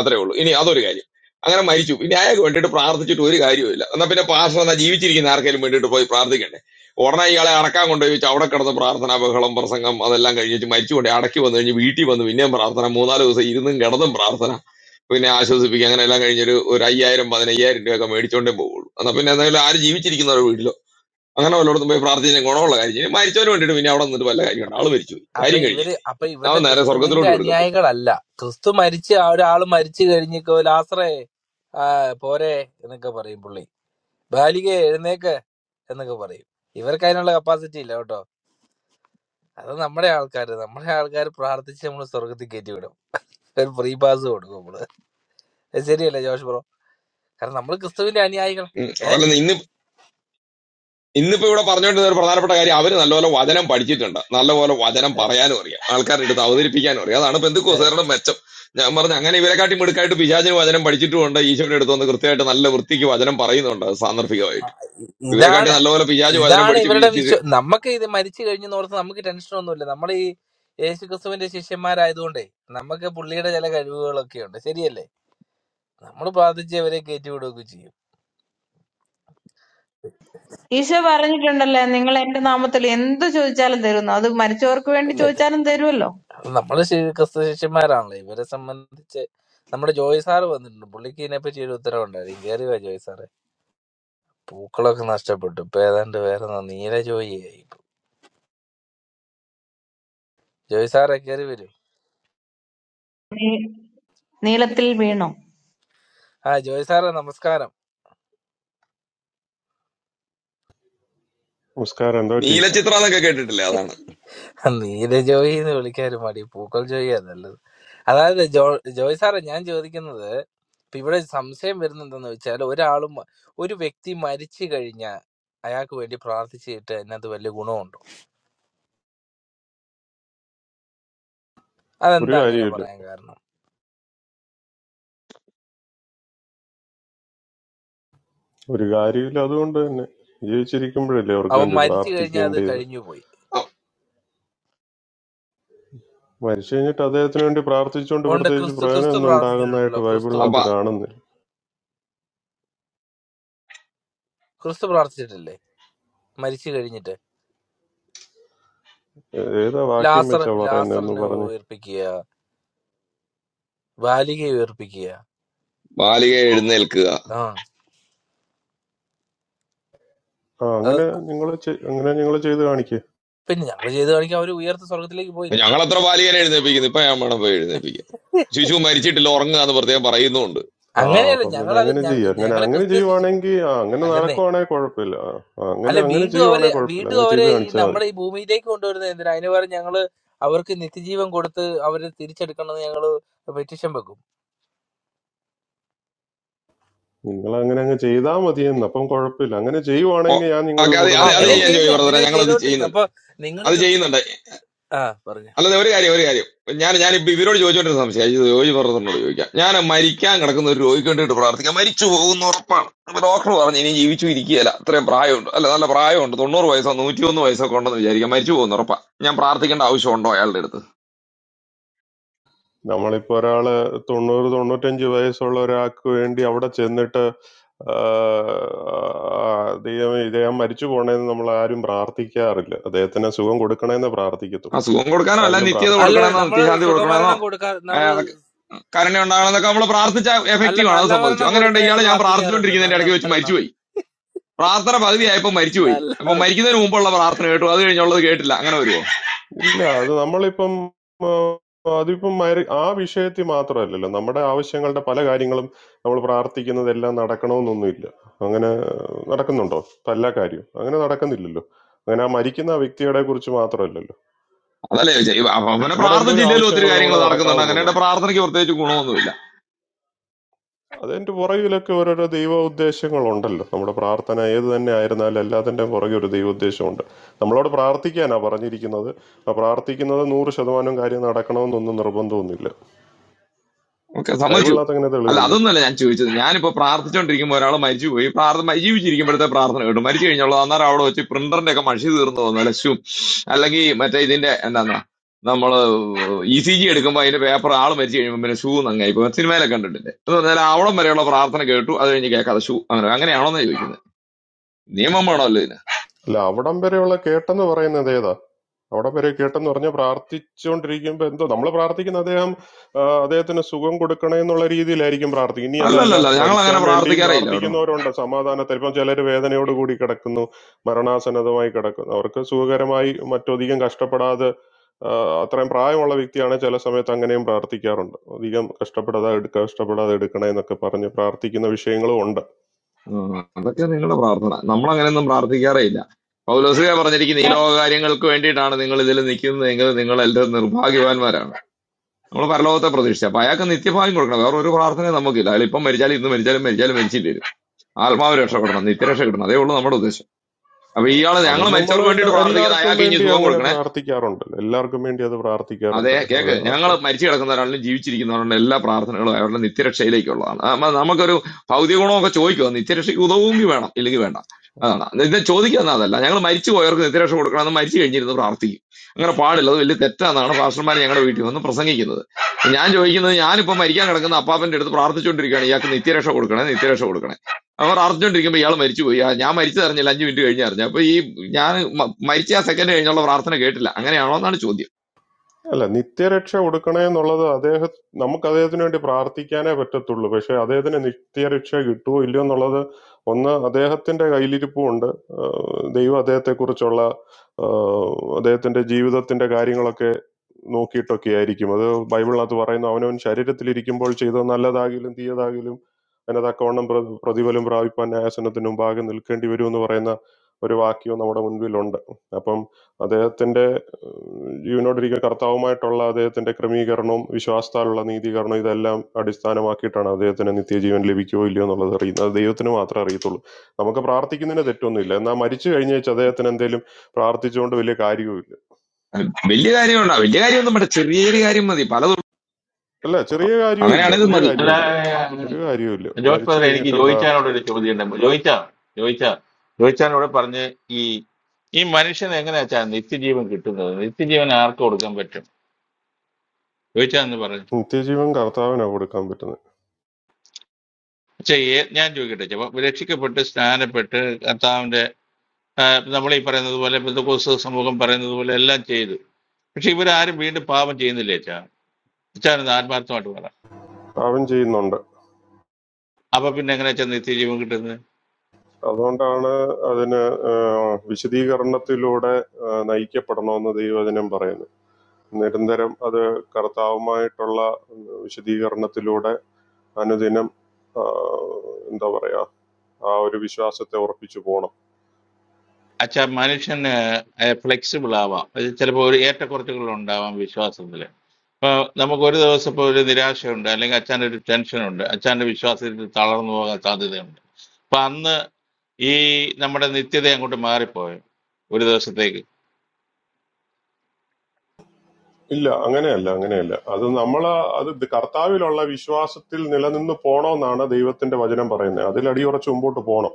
Speaker 4: അത്രേ ഉള്ളൂ ഇനി അതൊരു കാര്യം അങ്ങനെ മരിച്ചു ഇനി അയാൾക്ക് വേണ്ടിയിട്ട് പ്രാർത്ഥിച്ചിട്ട് ഒരു കാര്യവുമില്ല എന്നാ പിന്നെ പാസ്റ്റർ എന്നാ ജീവിച്ചിരിക്കുന്ന ആർക്കെങ്കിലും വേണ്ടിയിട്ട് പോയി പ്രാർത്ഥിക്കണ്ടേ ഉടനെ ഇയാളെ അടക്കാൻ കൊണ്ടുപോയി വെച്ച് അവിടെ കിടന്ന് പ്രാർത്ഥന ബഹളം പ്രസംഗം അതെല്ലാം കഴിഞ്ഞിട്ട് മരിച്ചു കൊണ്ട് അടക്കി വന്നു കഴിഞ്ഞ് വീട്ടിൽ വന്ന് പിന്നെയും പ്രാർത്ഥന മൂന്നാല് ദിവസം ഇരുന്നും കിടന്നും പ്രാർത്ഥന പിന്നെ ആശ്വസിപ്പിക്കുക അങ്ങനെ എല്ലാം കഴിഞ്ഞൊരു ഒരു അയ്യായിരം പതിനയ്യായിരം രൂപയൊക്കെ മേടിച്ചോണ്ടേ പോവുള്ളൂ എന്നാ പിന്നെ എന്തായാലും ആര് ജീവിച്ചിരിക്കുന്നവരുടെ വീട്ടിലോ അങ്ങനെ വല്ലയിടത്തും പോയി പ്രാർത്ഥിച്ചാൽ ഗുണമുള്ള കാര്യം ഇനി മരിച്ചവന് വേണ്ടിയിട്ട് പിന്നെ അവിടെ നിന്നിട്ട് വല്ല കാര്യമുണ്ട്
Speaker 18: അപ്പൊ
Speaker 4: ആള്
Speaker 18: ഈ-
Speaker 4: മരിച്ചു പോയി.
Speaker 18: അപ്പൊ
Speaker 4: കാര്യം
Speaker 18: ഇവര്
Speaker 4: കഴിഞ്ഞില്ലേ
Speaker 18: അപ്പൊ
Speaker 4: അവൻ
Speaker 18: ഇവരുടെ
Speaker 4: നേരെ
Speaker 18: ക്രിസ്തുവിന്റെ
Speaker 4: സ്വർഗത്തിലോട്ട് എടുക്കപ്പെട്ടു
Speaker 18: അനുയായികളല്ല ക്രിസ്തു മരിച്ച് ആ ഒരാൾ മരിച്ചു കഴിഞ്ഞിക്കോ ലാസറേ ആ പോരെ എന്നൊക്കെ പറയും പുള്ളി ബാലികെ എഴുന്നേക്ക് എന്നൊക്കെ പറയും ഇവർക്ക് അതിനുള്ള കപ്പാസിറ്റി ഇല്ല കേട്ടോ അത് നമ്മുടെ ആൾക്കാർ നമ്മുടെ ആൾക്കാർ പ്രാർത്ഥിച്ച് നമ്മൾ സ്വർഗത്തിൽ കയറ്റി വിടും ഒരു ഫ്രീ പാസ് കൊടുക്കും നമ്മള് അത് ശരിയല്ലേ ജോഷ് ബ്രോ കാരണം നമ്മൾ ക്രിസ്തുവിന്റെ അനുയായികൾ
Speaker 4: ഉം.
Speaker 18: ഏ
Speaker 4: അതല്ല ഇന്ന് ഇന്നിപ്പോ ഇവിടെ പറഞ്ഞുകൊണ്ടിരുന്ന ഒരു പ്രധാനപ്പെട്ട കാര്യം അവര് നല്ലപോലെ വചനം പഠിച്ചിട്ടുണ്ട് നല്ലപോലെ വചനം പറയാനും അറിയാം ആൾക്കാരുടെ അടുത്ത് അവതരിപ്പിക്കാനും അറിയാം അതാണ്
Speaker 18: ഏ?
Speaker 4: പെന്തുക്കോസുകാരുടെ മെച്ചം ഞാൻ പറഞ്ഞു അങ്ങനെ ഇവരെക്കാട്ടി മിടുക്കായിട്ട് പിശാചിന് വചനം പഠിച്ചിട്ടുമുണ്ട് ഈശോയുടെ അടുത്ത് വന്ന് കൃത്യമായിട്ട് നല്ല വൃത്തിക്ക് വചനം പറയുന്നുണ്ട്
Speaker 18: ആ,
Speaker 4: സാന്ദർഭികമായിട്ട്
Speaker 18: ഇ-
Speaker 4: ഇവരെക്കാട്ടി
Speaker 18: ഇതാണ്
Speaker 4: നല്ലപോലെ പിശാജ് വചനം
Speaker 18: ഇതാണ്
Speaker 4: പഠിച്ച്
Speaker 18: ഇവരുടെ
Speaker 4: പിശിച്ചിട്ട്
Speaker 18: വിശ്വ നമുക്ക് ഇത് മരിച്ചു കഴിഞ്ഞു ഓർത്ത് നമുക്ക് ടെൻഷൻ ഒന്നുമില്ല നമ്മൾ ഈ യേശു ക്രിസ്തുവിന്റെ ശിഷ്യന്മാരായതുകൊണ്ടേ നമുക്ക് പുള്ളിയുടെ ചില കഴിവുകളൊക്കെ ഉണ്ട് ശരിയല്ലേ നമ്മൾ പ്രാർത്ഥിച്ച് ഇവരെ കയറ്റി വിടുകയൊക്കെ ചെയ്യും
Speaker 13: ഈശോ പറഞ്ഞിട്ടുണ്ടല്ലോ, നിങ്ങൾ എന്റെ നാമത്തിൽ എന്ത് ചോദിച്ചാലും തരുന്നു. അത് മരിച്ചവർക്ക് വേണ്ടി
Speaker 18: പിന്നെ
Speaker 13: ചോദിച്ചാലും തരുമല്ലോ.
Speaker 18: നമ്മൾ ക്രിസ്തു ശിഷ്യന്മാരാണല്ലോ ഇവരെ സംബന്ധിച്ച് നമ്മുടെ ജോയ് സാറ് വന്നിട്ടുണ്ട് പുള്ളിക്ക് ഇതിനെപ്പറ്റി ഒരു ഉത്തരവുണ്ടായിരുന്നു കയറി വാ ജോയ് സാറെ പൂക്കളൊക്കെ നഷ്ടപ്പെട്ടു ഇപ്പൊ ഏതാണ്ട് വേറെ ഒന്നും, നീല ജോയി ആയി ജോയ് സാറെ കയറി വരൂ
Speaker 13: നീ- നീളത്തിൽ വീണോ?
Speaker 18: ആ ജോയ് സാറെ നമസ്കാരം
Speaker 19: നമസ്കാരം എന്താ പറ്റി
Speaker 4: നീലചിത്രം എന്നൊക്കെ കേട്ടിട്ടില്ലേ അതാണ്
Speaker 18: നീര ജോയി എന്ന് വിളിക്കാനും മടി പൂക്കോൾ ജോയിയാ നല്ലത് അതായത് ജോ ജോയ് സാറേ ഞാൻ ചോദിക്കുന്നത് ഇപ്പൊ ഇവിടെ സംശയം വരുന്നതെന്ന് വെച്ചാൽ ഒരാളും ഒരു വ്യക്തി മരിച്ചു കഴിഞ്ഞാൽ അയാൾക്ക് വേണ്ടി പ്രാർത്ഥിച്ചിട്ട് അതിനകത്ത് വലിയ ഗുണമുണ്ടോ
Speaker 19: ഒരു
Speaker 18: അതെന്താ അങ്ങനെ
Speaker 19: കാര്യമില്ല
Speaker 18: പറയാൻ കാരണം
Speaker 19: ഒരു കാര്യമില്ല അതുകൊണ്ട് തന്നെ ജീവിച്ചിരിക്കുമ്പോഴല്ലേ അവർക്ക്
Speaker 18: അവൻ
Speaker 19: വേണ്ടി
Speaker 18: മരിച്ചു കഴിഞ്ഞാൽ അത്
Speaker 19: പ്രാർത്ഥിക്കേണ്ടത്
Speaker 18: കഴിഞ്ഞു പോയി
Speaker 4: അ-
Speaker 19: മരിച്ചു കഴിഞ്ഞിട്ട് അദ്ദേഹത്തിന് വേണ്ടി പ്രാർത്ഥിച്ചുകൊണ്ട്
Speaker 18: ഉണ്ട്
Speaker 19: പ്രത്യേകിച്ച്
Speaker 18: ക്രിസ്തു ക്രിസ്തു
Speaker 19: പ്രയോജനമൊന്നും ഉണ്ടാകുന്നതായിട്ട്
Speaker 18: പ്രാർത്ഥിച്ചിട്ടുണ്ടല്ലോ ക്രിസ്തു
Speaker 4: അപ്പൊ
Speaker 19: ബൈബിളിനകത്ത് കാണുന്നില്ല
Speaker 18: ക്രിസ്തു പ്രാർത്ഥിച്ചിട്ടില്ലേ മരിച്ചു കഴിഞ്ഞിട്ട്
Speaker 19: ഏ- ഏതാ വാക്യം
Speaker 18: ലാസർ
Speaker 19: വെച്ചാ പറയുന്നതെന്ന്
Speaker 18: ലാസറിനെ
Speaker 19: പറഞ്ഞ്
Speaker 18: ഉയർപ്പിക്കുക ബാലികയെ ഉയർപ്പിക്കുക
Speaker 4: ബാലിക എഴുന്നേൽക്കുക
Speaker 18: ആ
Speaker 19: ആ
Speaker 18: അത്
Speaker 19: അങ്ങനെ നിങ്ങൾ അങ്ങനെ നിങ്ങൾ ചെയ്ത് കാണിക്കുക
Speaker 18: പിന്നെ ഞങ്ങൾ ചെയ്ത് കാണിക്കാൻ അവര് ഉയർത്ത സ്വർഗത്തിലേക്ക് പോയില്ലേ
Speaker 4: ഞങ്ങൾ അത്ര ബാലികനെ എഴുന്നേൽപ്പിക്കുന്നു ഇപ്പൊ ഞാൻ വേണം പോയി എഴുന്നേൽപ്പിക്കാൻ ശിശു മരിച്ചിട്ടില്ല ഉറങ്ങുക എന്ന് പ്രത്യേകം പറയുന്നുണ്ട്
Speaker 19: ആ
Speaker 18: അങ്ങനെയല്ല
Speaker 19: അപ്പം പിന്നെ
Speaker 18: ഞങ്ങളത്
Speaker 19: അങ്ങനെ
Speaker 18: ഞ-
Speaker 19: ചെയ്യുക അങ്ങനെ
Speaker 18: ഞങ്ങള്
Speaker 19: അങ്ങനെ
Speaker 18: ക്രിസ്തു ശിശു
Speaker 19: ചെയ്യുവാണെങ്കിൽ ആ അങ്ങനെ
Speaker 18: അല്ലെന്നേ
Speaker 19: നടക്കുവാണെങ്കിൽ കുഴപ്പമില്ല ആ ആ, അങ്ങനെ
Speaker 18: അല്ല
Speaker 19: അങ്ങനെ
Speaker 18: വീണ്ടും അവരെ
Speaker 19: ചെയ്യുവാണെങ്കിൽ കുഴപ്പമില്ല
Speaker 18: വീണ്ടും
Speaker 19: അങ്ങനെ
Speaker 18: അവരെ
Speaker 19: ചെയ്ത്
Speaker 18: ഈ
Speaker 19: കാണിച്ചാൽ മതി
Speaker 18: നമ്മുടെ ഈ ഭൂമിയിലേക്ക് കൊണ്ടുവരുന്നത് എന്തിനാ അതിന് പകരം ഞങ്ങള് അവർക്ക് നിത്യജീവൻ കൊടുത്ത് അവരെ തിരിച്ചെടുക്കണമെന്ന് ഞങ്ങള് പെറ്റിഷൻ വെക്കും
Speaker 19: നിങ്ങൾ അങ്ങനെ അങ്ങ് ചെയ്താൽ മതിയെന്ന് അപ്പം കുഴപ്പമില്ല അങ്ങനെ
Speaker 4: ഓ,
Speaker 19: ചെയ്യുവാണെങ്കിൽ ഞാൻ നിങ്ങളുടെ
Speaker 4: ഒക്കെ അത്
Speaker 19: കൂടെ
Speaker 18: ആ
Speaker 4: അത് അത്
Speaker 18: അങ്ങനെ
Speaker 19: നിൽക്കാമെന്ന്
Speaker 4: ചെയ്യാൻ ജോയി
Speaker 18: ചെയ്യുന്നേ
Speaker 4: പറഞ്ഞ
Speaker 18: അങ്ങനെ
Speaker 4: ഞങ്ങൾ അത്
Speaker 18: ചെയ്തോണ്ടിരിക്കും
Speaker 4: ചെയ്യുന്നുണ്ട്
Speaker 18: അപ്പൊ നിങ്ങൾ
Speaker 4: അത് ചെയ്യുന്നുണ്ട്
Speaker 18: ആ പറഞ്ഞു
Speaker 4: അല്ലാതെ ഒരു കാര്യം ഒരു കാര്യം ഞാൻ ഞാനിപ്പോ ഇവരോട് ചോദിച്ചോണ്ടിരുന്ന സംശയം ഇത് ജോജി പറഞ്ഞോട് ചോദിക്കാം ഞാൻ മരിക്കാൻ കിടക്കുന്ന ഒരു രോഗിക്ക് വേണ്ടിയിട്ട് പ്രാർത്ഥിക്കാം മരിച്ചു പോകുന്ന ഉറപ്പാണ് അപ്പൊ ഡോക്ടർ പറഞ്ഞു ഇനി ജീവിച്ചു ഇരിക്കുകയില്ല അത്രയും പ്രായമുണ്ട് അല്ല നല്ല പ്രായമുണ്ട് തൊണ്ണൂറ് വയസ്സോ നൂറ്റിയൊന്ന് വയസ്സൊക്കെ ഉണ്ടെന്ന് വിചാരിക്കാം മരിച്ചു പോകുന്ന ഉറപ്പാ ഞാൻ പ്രാർത്ഥിക്കേണ്ട ആവശ്യമുണ്ടോ അയാളുടെ അടുത്ത്
Speaker 19: നമ്മളിപ്പോ ഒരാള് 90, 95 വയസ്സുള്ള ഒരാൾക്ക് വേണ്ടി അവിടെ ചെന്നിട്ട് ആഹ് ദൈവമേ ഇദ്ദേഹം മരിച്ചു പോണേന്ന് നമ്മൾ ആരും പ്രാർത്ഥിക്കാറില്ല. അദ്ദേഹത്തിന് സുഖം കൊടുക്കണേന്നേ
Speaker 4: ആ
Speaker 19: പ്രാർത്ഥിക്കത്തുള്ളൂ.
Speaker 4: സുഖം കൊടുക്കാനോ അല്ല
Speaker 19: ആരെങ്കിലും
Speaker 4: നിത്യത
Speaker 18: അല്ല
Speaker 19: പ്രാർത്ഥിക്കുവോ
Speaker 4: കൊടുക്കണമെന്നോ
Speaker 19: അങ്ങനെ?
Speaker 18: നമ്മള്
Speaker 4: നിത്യശാന്തി കൊടുക്കണമെന്നോ
Speaker 18: സുഖമരണം കൊടുക്കാ നമ്മള്
Speaker 4: അയാൾ കരുണ ഉണ്ടാകണമെന്നൊക്കെ നമ്മൾ പ്രാർത്ഥിച്ച
Speaker 18: അല്ല
Speaker 4: എഫക്റ്റീവ് ആണ് അത്
Speaker 18: നല്ല
Speaker 4: സംബന്ധിച്ചു
Speaker 18: മരണം
Speaker 4: അങ്ങനെയുണ്ട് ഇയാൾ
Speaker 18: കൊടുക്കണേന്ന്
Speaker 4: ഞാൻ
Speaker 18: പ്രാർത്ഥിക്കാറുണ്ട്
Speaker 4: പ്രാർത്ഥിച്ചുകൊണ്ടിരിക്കുന്നതിന്റെ
Speaker 18: നല്ല
Speaker 4: ഇടയ്ക്ക് വെച്ച്
Speaker 18: മരണം
Speaker 4: മരിച്ചുപോയി പ്രാർത്ഥന പകുതിയായപ്പോൾ മരിച്ചുപോയി
Speaker 18: നല്ല
Speaker 4: അപ്പൊ മരിക്കുന്നതിന് മുമ്പുള്ള പ്രാർത്ഥന കേട്ടു അത് കഴിഞ്ഞുള്ളത് കേട്ടില്ല അങ്ങനെ വരുമോ
Speaker 19: ഇല്ല. അത് നമ്മളിപ്പം ആഹ് അതിപ്പം മരി- ആ വിഷയത്തിൽ മാത്രമല്ലല്ലോ നമ്മുടെ ആവശ്യങ്ങളുടെ പല കാര്യങ്ങളും നമ്മൾ പ്രാർത്ഥിക്കുന്നതെല്ലാം നടക്കണമെന്നൊന്നുമില്ല. അങ്ങനെ നടക്കുന്നുണ്ടോ? ഇപ്പം എല്ലാ കാര്യവും അങ്ങനെ നടക്കുന്നില്ലല്ലോ. അങ്ങനെ ആ മരിക്കുന്ന ആ വ്യക്തികളെ കുറിച്ച് മാത്രമല്ലല്ലോ.
Speaker 4: അതല്ലേ ചോദിച്ചേ അവനെ
Speaker 19: നമ്മുടെ എന്തോ ഒരു
Speaker 4: പ്രാർത്ഥിച്ചില്ലല്ലോ ഒത്തിരി
Speaker 19: ആവശ്യങ്ങൾ നമ്മൾ
Speaker 4: കാര്യങ്ങൾ
Speaker 19: നടക്കാതെ
Speaker 4: നടക്കുന്നുണ്ട് അങ്ങനെ
Speaker 19: പോകുന്നുണ്ട്
Speaker 4: പ്രാർത്ഥനയ്ക്ക് പ്രത്യേകിച്ച് ഗുണമൊന്നുമില്ല
Speaker 19: അതിൻ്റെ പുറകിലൊക്കെ ഓരോരോ ദൈവ ഉദ്ദേശങ്ങളുണ്ടല്ലോ നമ്മുടെ പ്രാർത്ഥന ഏത് തന്നെ ആയിരുന്നാലും എല്ലാത്തിൻ്റെ പുറകെ ഒരു ദൈവ ഉദ്ദേശമുണ്ട് നമ്മളോട് പ്രാർത്ഥിക്കാനാണ് പറഞ്ഞിരിക്കുന്നത് ആ പ്രാർത്ഥിക്കുന്നത് നൂറ് ശതമാനം കാര്യം നടക്കണമെന്നൊന്നും നിർബന്ധമൊന്നുമില്ല
Speaker 4: ഓക്കെ സമ്മതിച്ചു
Speaker 19: ബൈബിളിനകത്ത് അങ്ങനെ
Speaker 4: അല്ല
Speaker 19: തെളിവൊന്നുമില്ല
Speaker 4: അതൊന്നുമല്ല ഞാൻ ചോദിച്ചത് ഞാനിപ്പോ പ്രാർത്ഥിച്ചുകൊണ്ടിരിക്കുമ്പോൾ ഒരാൾ മരിച്ചു പോയി പ്രാർത്ഥന ജീവിച്ചിരിക്കുമ്പോഴത്തെ പ്രാർത്ഥന കേട്ടു മരിച്ചു കഴിഞ്ഞുള്ള അന്നേരം അവിടെ വെച്ച് പ്രിന്ററിന്റെ ഒക്കെ മഷി തീർന്നു പോകുന്നു ലശും അല്ലെങ്കിൽ മറ്റേ ഇതിന്റെ എന്താന്നാ നമ്മള് ഇ സി ജി എടുക്കുമ്പോൾ അതിന്റെ പേപ്പർ ആൾ മരിച്ചു കഴിയുമ്പോൾ പിന്നെ ഷൂ നങ്ങായി ഇപ്പൊ സിനിമയിലൊക്കെ കണ്ടിട്ടില്ലേ എന്ന് പറഞ്ഞാൽ അവിടം വരെയുള്ള പ്രാർത്ഥന കേട്ടു അത് കഴിഞ്ഞ് കേൾക്കാതെ ഷൂ അങ്ങനെ അങ്ങനെയാണോന്ന് ചോദിക്കുന്നത് നിയമം വേണമല്ലോ ഇതിന്
Speaker 19: അല്ല അവിടം വരെയുള്ള കേട്ടെന്ന് പറയുന്നത് ഏതാ അവിടെ വരെ കേട്ടെന്ന് പറഞ്ഞ പ്രാർത്ഥിച്ചുകൊണ്ടിരിക്കുമ്പോൾ എന്തോ നമ്മൾ പ്രാർത്ഥിക്കുന്ന അദ്ദേഹം ആ, അദ്ദേഹത്തിന് സുഖം കൊടുക്കണേ എന്നുള്ള രീതിയിലായിരിക്കും പ്രാർത്ഥിക്കുന്നത് ഇനി അതല്ല
Speaker 4: അല്ലല്ലല്ല ഞങ്ങൾ
Speaker 19: മരിക്കാൻ
Speaker 4: അങ്ങനെ
Speaker 19: വേണ്ടിയും
Speaker 4: പ്രാർത്ഥിക്കാറേ ഇല്ല കേട്ടോ
Speaker 19: പ്രാർത്ഥിക്കുന്നവരുണ്ട് സമാധാനത്തിൽ ഇപ്പം ചിലർ വേദനയോട് കൂടി കിടക്കുന്നു മരണാസന്നതമായി കിടക്കുന്നു അവർക്ക് സുഖകരമായി മറ്റധികം കഷ്ടപ്പെടാതെ ആ, അത്രയും പ്രായമുള്ള വ്യക്തിയാണ് ചില സമയത്ത് അങ്ങനെയും പ്രാർത്ഥിക്കാറുണ്ട് അധികം കഷ്ടപ്പെടാതെ എടുക്ക കഷ്ടപ്പെടാതെ എടുക്കണേ എന്നൊക്കെ പറഞ്ഞ് പ്രാർത്ഥിക്കുന്ന വിഷയങ്ങളും ഉണ്ട്
Speaker 4: ആ, അതൊക്കെ നിങ്ങളുടെ പ്രാർത്ഥന നമ്മളങ്ങനെയൊന്നും പ്രാർത്ഥിക്കാറേ ഇല്ല പൗലോസിക പറഞ്ഞിരിക്കുന്ന ഈ
Speaker 13: ഞാൻ-
Speaker 4: ലോക കാര്യങ്ങൾക്ക് വേണ്ടിയിട്ടാണ് നിങ്ങൾ ഇതിൽ നിൽക്കുന്നതെങ്കിൽ നിങ്ങൾ എല്ലാവരും നിർഭാഗ്യവാന്മാരാണ് നമ്മൾ പരലോകത്തെ പ്രതീക്ഷിച്ച അപ്പൊ അയാൾക്ക് നിത്യഭാഗ്യം കൊടുക്കണം വേറെ ഒരു പ്രാർത്ഥനയും നമുക്കില്ല അയാൾ ഇപ്പം മരിച്ചാലും ഇന്ന് മരിച്ചാലും മരിച്ചാലും മരിച്ചിട്ട് വരും ആത്മാവ്
Speaker 19: ആ
Speaker 4: രക്ഷപ്പെടണം നിത്യരക്ഷ കിട്ടണം അതേ ഉള്ളൂ നമ്മുടെ ഉദ്ദേശം അപ്പൊ ഇയാൾ
Speaker 19: അത്
Speaker 4: ഞങ്ങൾ
Speaker 19: നമ്മൾ
Speaker 4: മരിച്ചവർക്ക് വേണ്ടിയിട്ട് പ്രാർത്ഥിക്കുന്ന
Speaker 19: എല്ലാവർക്കും
Speaker 4: അയാൾക്ക് ഇനി
Speaker 19: വേണ്ടി
Speaker 4: സുഖം
Speaker 19: അങ്ങനെ
Speaker 4: കൊടുക്കണം
Speaker 19: പ്രാർത്ഥിക്കാറുണ്ടല്ലോ എല്ലാവർക്കും വേണ്ടി അത്
Speaker 4: അതെ
Speaker 19: പ്രാർത്ഥിക്കാറുണ്ടല്ലോ
Speaker 4: കേക്ക് ഞങ്ങൾ
Speaker 19: അത്
Speaker 4: മരിച്ചു കിടക്കുന്ന ഒരാളിനും ജീവിച്ചിരിക്കുന്ന ഒരാളിനും എല്ലാ പ്രാർത്ഥനകളും അവരുടെ നിത്യരക്ഷയിലേക്കുള്ളതാണ് ആ, മ- നമുക്കൊരു ഭൗതിക ഗുണമൊക്കെ ചോദിക്കുക നിത്യരക്ഷയ്ക്ക് ഉദവുമെങ്കിൽ വേണം ഇല്ലെങ്കിൽ വേണ്ട അതാണ് ഇത് ചോദിക്കുന്ന അതല്ല ഞങ്ങൾ മരിച്ചു പോയവർക്ക് നിത്യരക്ഷ കൊടുക്കണമെന്ന് മരിച്ചു കഴിഞ്ഞിരുന്ന് പ്രാർത്ഥിക്കും അങ്ങനെ പാടില്ല അത് വലിയ തെറ്റാന്നാണ് പാസ്റ്റർമാർ ഞങ്ങളുടെ വീട്ടിൽ വന്ന് പ്രസംഗിക്കുന്നത് ഞാൻ ചോദിക്കുന്നത് ഞാനിപ്പോൾ മരിക്കാൻ കിടക്കുന്ന അപ്പാപ്പന്റെ അടുത്ത് പ്രാർത്ഥിച്ചുകൊണ്ടിരിക്കുകയാണ് ഇയാൾക്ക് നിത്യരക്ഷ കൊടുക്കണേ നിത്യരക്ഷ കൊടുക്കണേ അവർ പ്രാർത്ഥിച്ചുകൊണ്ടിരിക്കുമ്പോൾ ഇയാൾ മരിച്ചുപോയി ആ, ഞാൻ മരിച്ചതറിഞ്ഞില്ല അഞ്ച് മിനിറ്റ് കഴിഞ്ഞ് അറിഞ്ഞു അപ്പൊ ഈ ഞാൻ മ- മരിച്ച ആ സെക്കൻഡ് കഴിഞ്ഞുള്ള പ്രാർത്ഥന കേട്ടില്ല അങ്ങനെയാണോ എന്നാണ് ചോദ്യം
Speaker 19: അല്ല നിത്യരക്ഷ കൊടുക്കണേ എന്നുള്ളത് അദ്ദേഹം നമുക്ക് അദ്ദേഹത്തിന് വേണ്ടി പ്രാർത്ഥിക്കാനേ പറ്റത്തുള്ളൂ പക്ഷെ അദ്ദേഹത്തിന് നിത്യരക്ഷ കിട്ടുമോ ഇല്ലയോ എന്നുള്ളത് ഒന്ന് അദ്ദേഹത്തിന്റെ കയ്യിലിരിപ്പുണ്ട് ആ, ദൈവം അദ്ദേഹത്തെക്കുറിച്ചുള്ള ആ, അദ്ദേഹത്തിന്റെ ജീവിതത്തിന്റെ കാര്യങ്ങളൊക്കെ നോക്കിയിട്ടൊക്കെ ആയിരിക്കും അത് ബൈബിളിനകത്ത് പറയുന്നു അവനവൻ ശരീരത്തിലിരിക്കുമ്പോൾ ചെയ്ത നല്ലതാകിലും തീയതാകിലും അതിന് തക്കവണ്ണം പ്ര- പ്രതിഫലം പ്രാപിപ്പാൻ ന്യായസനത്തിന് മുമ്പാകെ നിൽക്കേണ്ടി വരും എന്ന് പറയുന്ന ഒരു വാക്യവും നമ്മുടെ മുൻപിലുണ്ട് അപ്പം അദ്ദേഹത്തിന്റെ ജീവനോടിരിക്കുന്ന കർത്താവുമായിട്ടുള്ള അദ്ദേഹത്തിന്റെ ക്രമീകരണവും വിശ്വാസത്താലുള്ള നീതീകരണവും ഇതെല്ലാം അടിസ്ഥാനമാക്കിയിട്ടാണ് അദ്ദേഹത്തിന് നിത്യജീവൻ ലഭിക്കുമോ ഇല്ലയോ എന്നുള്ളത് അറിയുന്നത് അത് ദൈവത്തിന് മാത്രമേ അറിയത്തുള്ളൂ നമുക്ക് പ്രാർത്ഥിക്കുന്നതിന് തെറ്റൊന്നുമില്ല എന്നാൽ മരിച്ചു കഴിഞ്ഞ വെച്ച് അദ്ദേഹത്തിന് എന്തെങ്കിലും പ്രാർത്ഥിച്ചുകൊണ്ട് വലിയ കാര്യവുമില്ല
Speaker 4: വലിയ കാര്യമുണ്ടോ വലിയ കാര്യമൊന്നും പറ്റ ചെറിയ ചെറിയ കാര്യം മതി പല ദുർ-
Speaker 19: അല്ല ചെറിയ കാര്യവുമില്ല
Speaker 4: അങ്ങനെയാണെങ്കിൽ
Speaker 19: ഒരു
Speaker 4: മതി
Speaker 17: അല്ല,
Speaker 19: കാര്യവുമില്ല ഒരു കാര്യവുമില്ല
Speaker 17: ജോഷ്
Speaker 19: മരിച്ചു
Speaker 17: ബ്രദറെ എനിക്ക്
Speaker 19: കഴിഞ്ഞിട്ട് പ്രാർത്ഥ
Speaker 17: ജോയിച്ചാനോട് ഒരു ചോദ്യം ഉണ്ട് ജോയിച്ചാ ജോയിച്ചാ ജോയിച്ചാനോട് പറഞ്ഞ് ഈ ഈ മനുഷ്യന് എങ്ങനെയാ വെച്ചാ നിത്യജീവൻ കിട്ടുന്നത് നിത്യജീവൻ ആർക്ക് കൊടുക്കാൻ പറ്റും ജോയിച്ചാന്ന് പറഞ്ഞു
Speaker 19: നിത്യജീവൻ കർത്താവിനാണ് കൊടുക്കാൻ പറ്റുന്നത്
Speaker 17: പക്ഷേ ഏ- ഞാൻ ചോദിക്കട്ടെ ചെ അപ്പൊ രക്ഷിക്കപ്പെട്ട് സ്നാനപ്പെട്ട് കർത്താവിന്റെ നമ്മൾ ഈ പറയുന്നത് പോലെ പെന്തക്കോസ്ത് സമൂഹം പറയുന്നത് പോലെ എല്ലാം ചെയ്തു പക്ഷെ ഇവരാരും വീണ്ടും പാപം ചെയ്യുന്നില്ലേ ചാ ചാൻ ആത്മാർത്ഥമായിട്ട് പറ
Speaker 19: പാപം ചെയ്യുന്നുണ്ട്
Speaker 17: അപ്പൊ പിന്നെ എങ്ങനെയാ ചാ നിത്യജീവൻ കിട്ടുന്നത്
Speaker 19: അതുകൊണ്ടാണ് അതിന് ആ, വിശദീകരണത്തിലൂടെ ആ, നയിക്കപ്പെടണമെന്ന് ദൈവചനം പറയുന്നത് നിരന്തരം അത് കർത്താവുമായിട്ടുള്ള വിശദീകരണത്തിലൂടെ അനുദിനം ആ, എന്താ പറയാ ആ ഒരു വിശ്വാസത്തെ ഉറപ്പിച്ചു പോകണം
Speaker 17: അച്ഛാ മനുഷ്യന് ഫ്ലെക്സിബിൾ ആവാം അത് ചിലപ്പോൾ ഒരു ഏറ്റക്കുറച്ചുകൾ ഉണ്ടാവാം വിശ്വാസത്തിൽ ഇപ്പോൾ നമുക്ക് ഒരു ദിവസം ഇപ്പോൾ ഒരു നിരാശയുണ്ട് അല്ലെങ്കിൽ അച്ഛൻ്റെ ഒരു ടെൻഷനുണ്ട് അച്ഛൻ്റെ വിശ്വാസത്തിൽ തളർന്നു പോകാൻ സാധ്യതയുണ്ട് അപ്പം അന്ന് ഈ നമ്മുടെ നിത്യത അങ്ങോട്ട് മാറിപ്പോയി ഒരു ദിവസത്തേക്ക്
Speaker 19: ഇല്ല അങ്ങനെയല്ല അങ്ങനെയല്ല അത് നമ്മൾ അത് കർത്താവിലുള്ള വിശ്വാസത്തിൽ നിലനിന്ന് പോണമെന്നാണ് ദൈവത്തിന്റെ വചനം പറയുന്നത് അതിൽ അടിയുറച്ച് മുമ്പോട്ട് പോകണം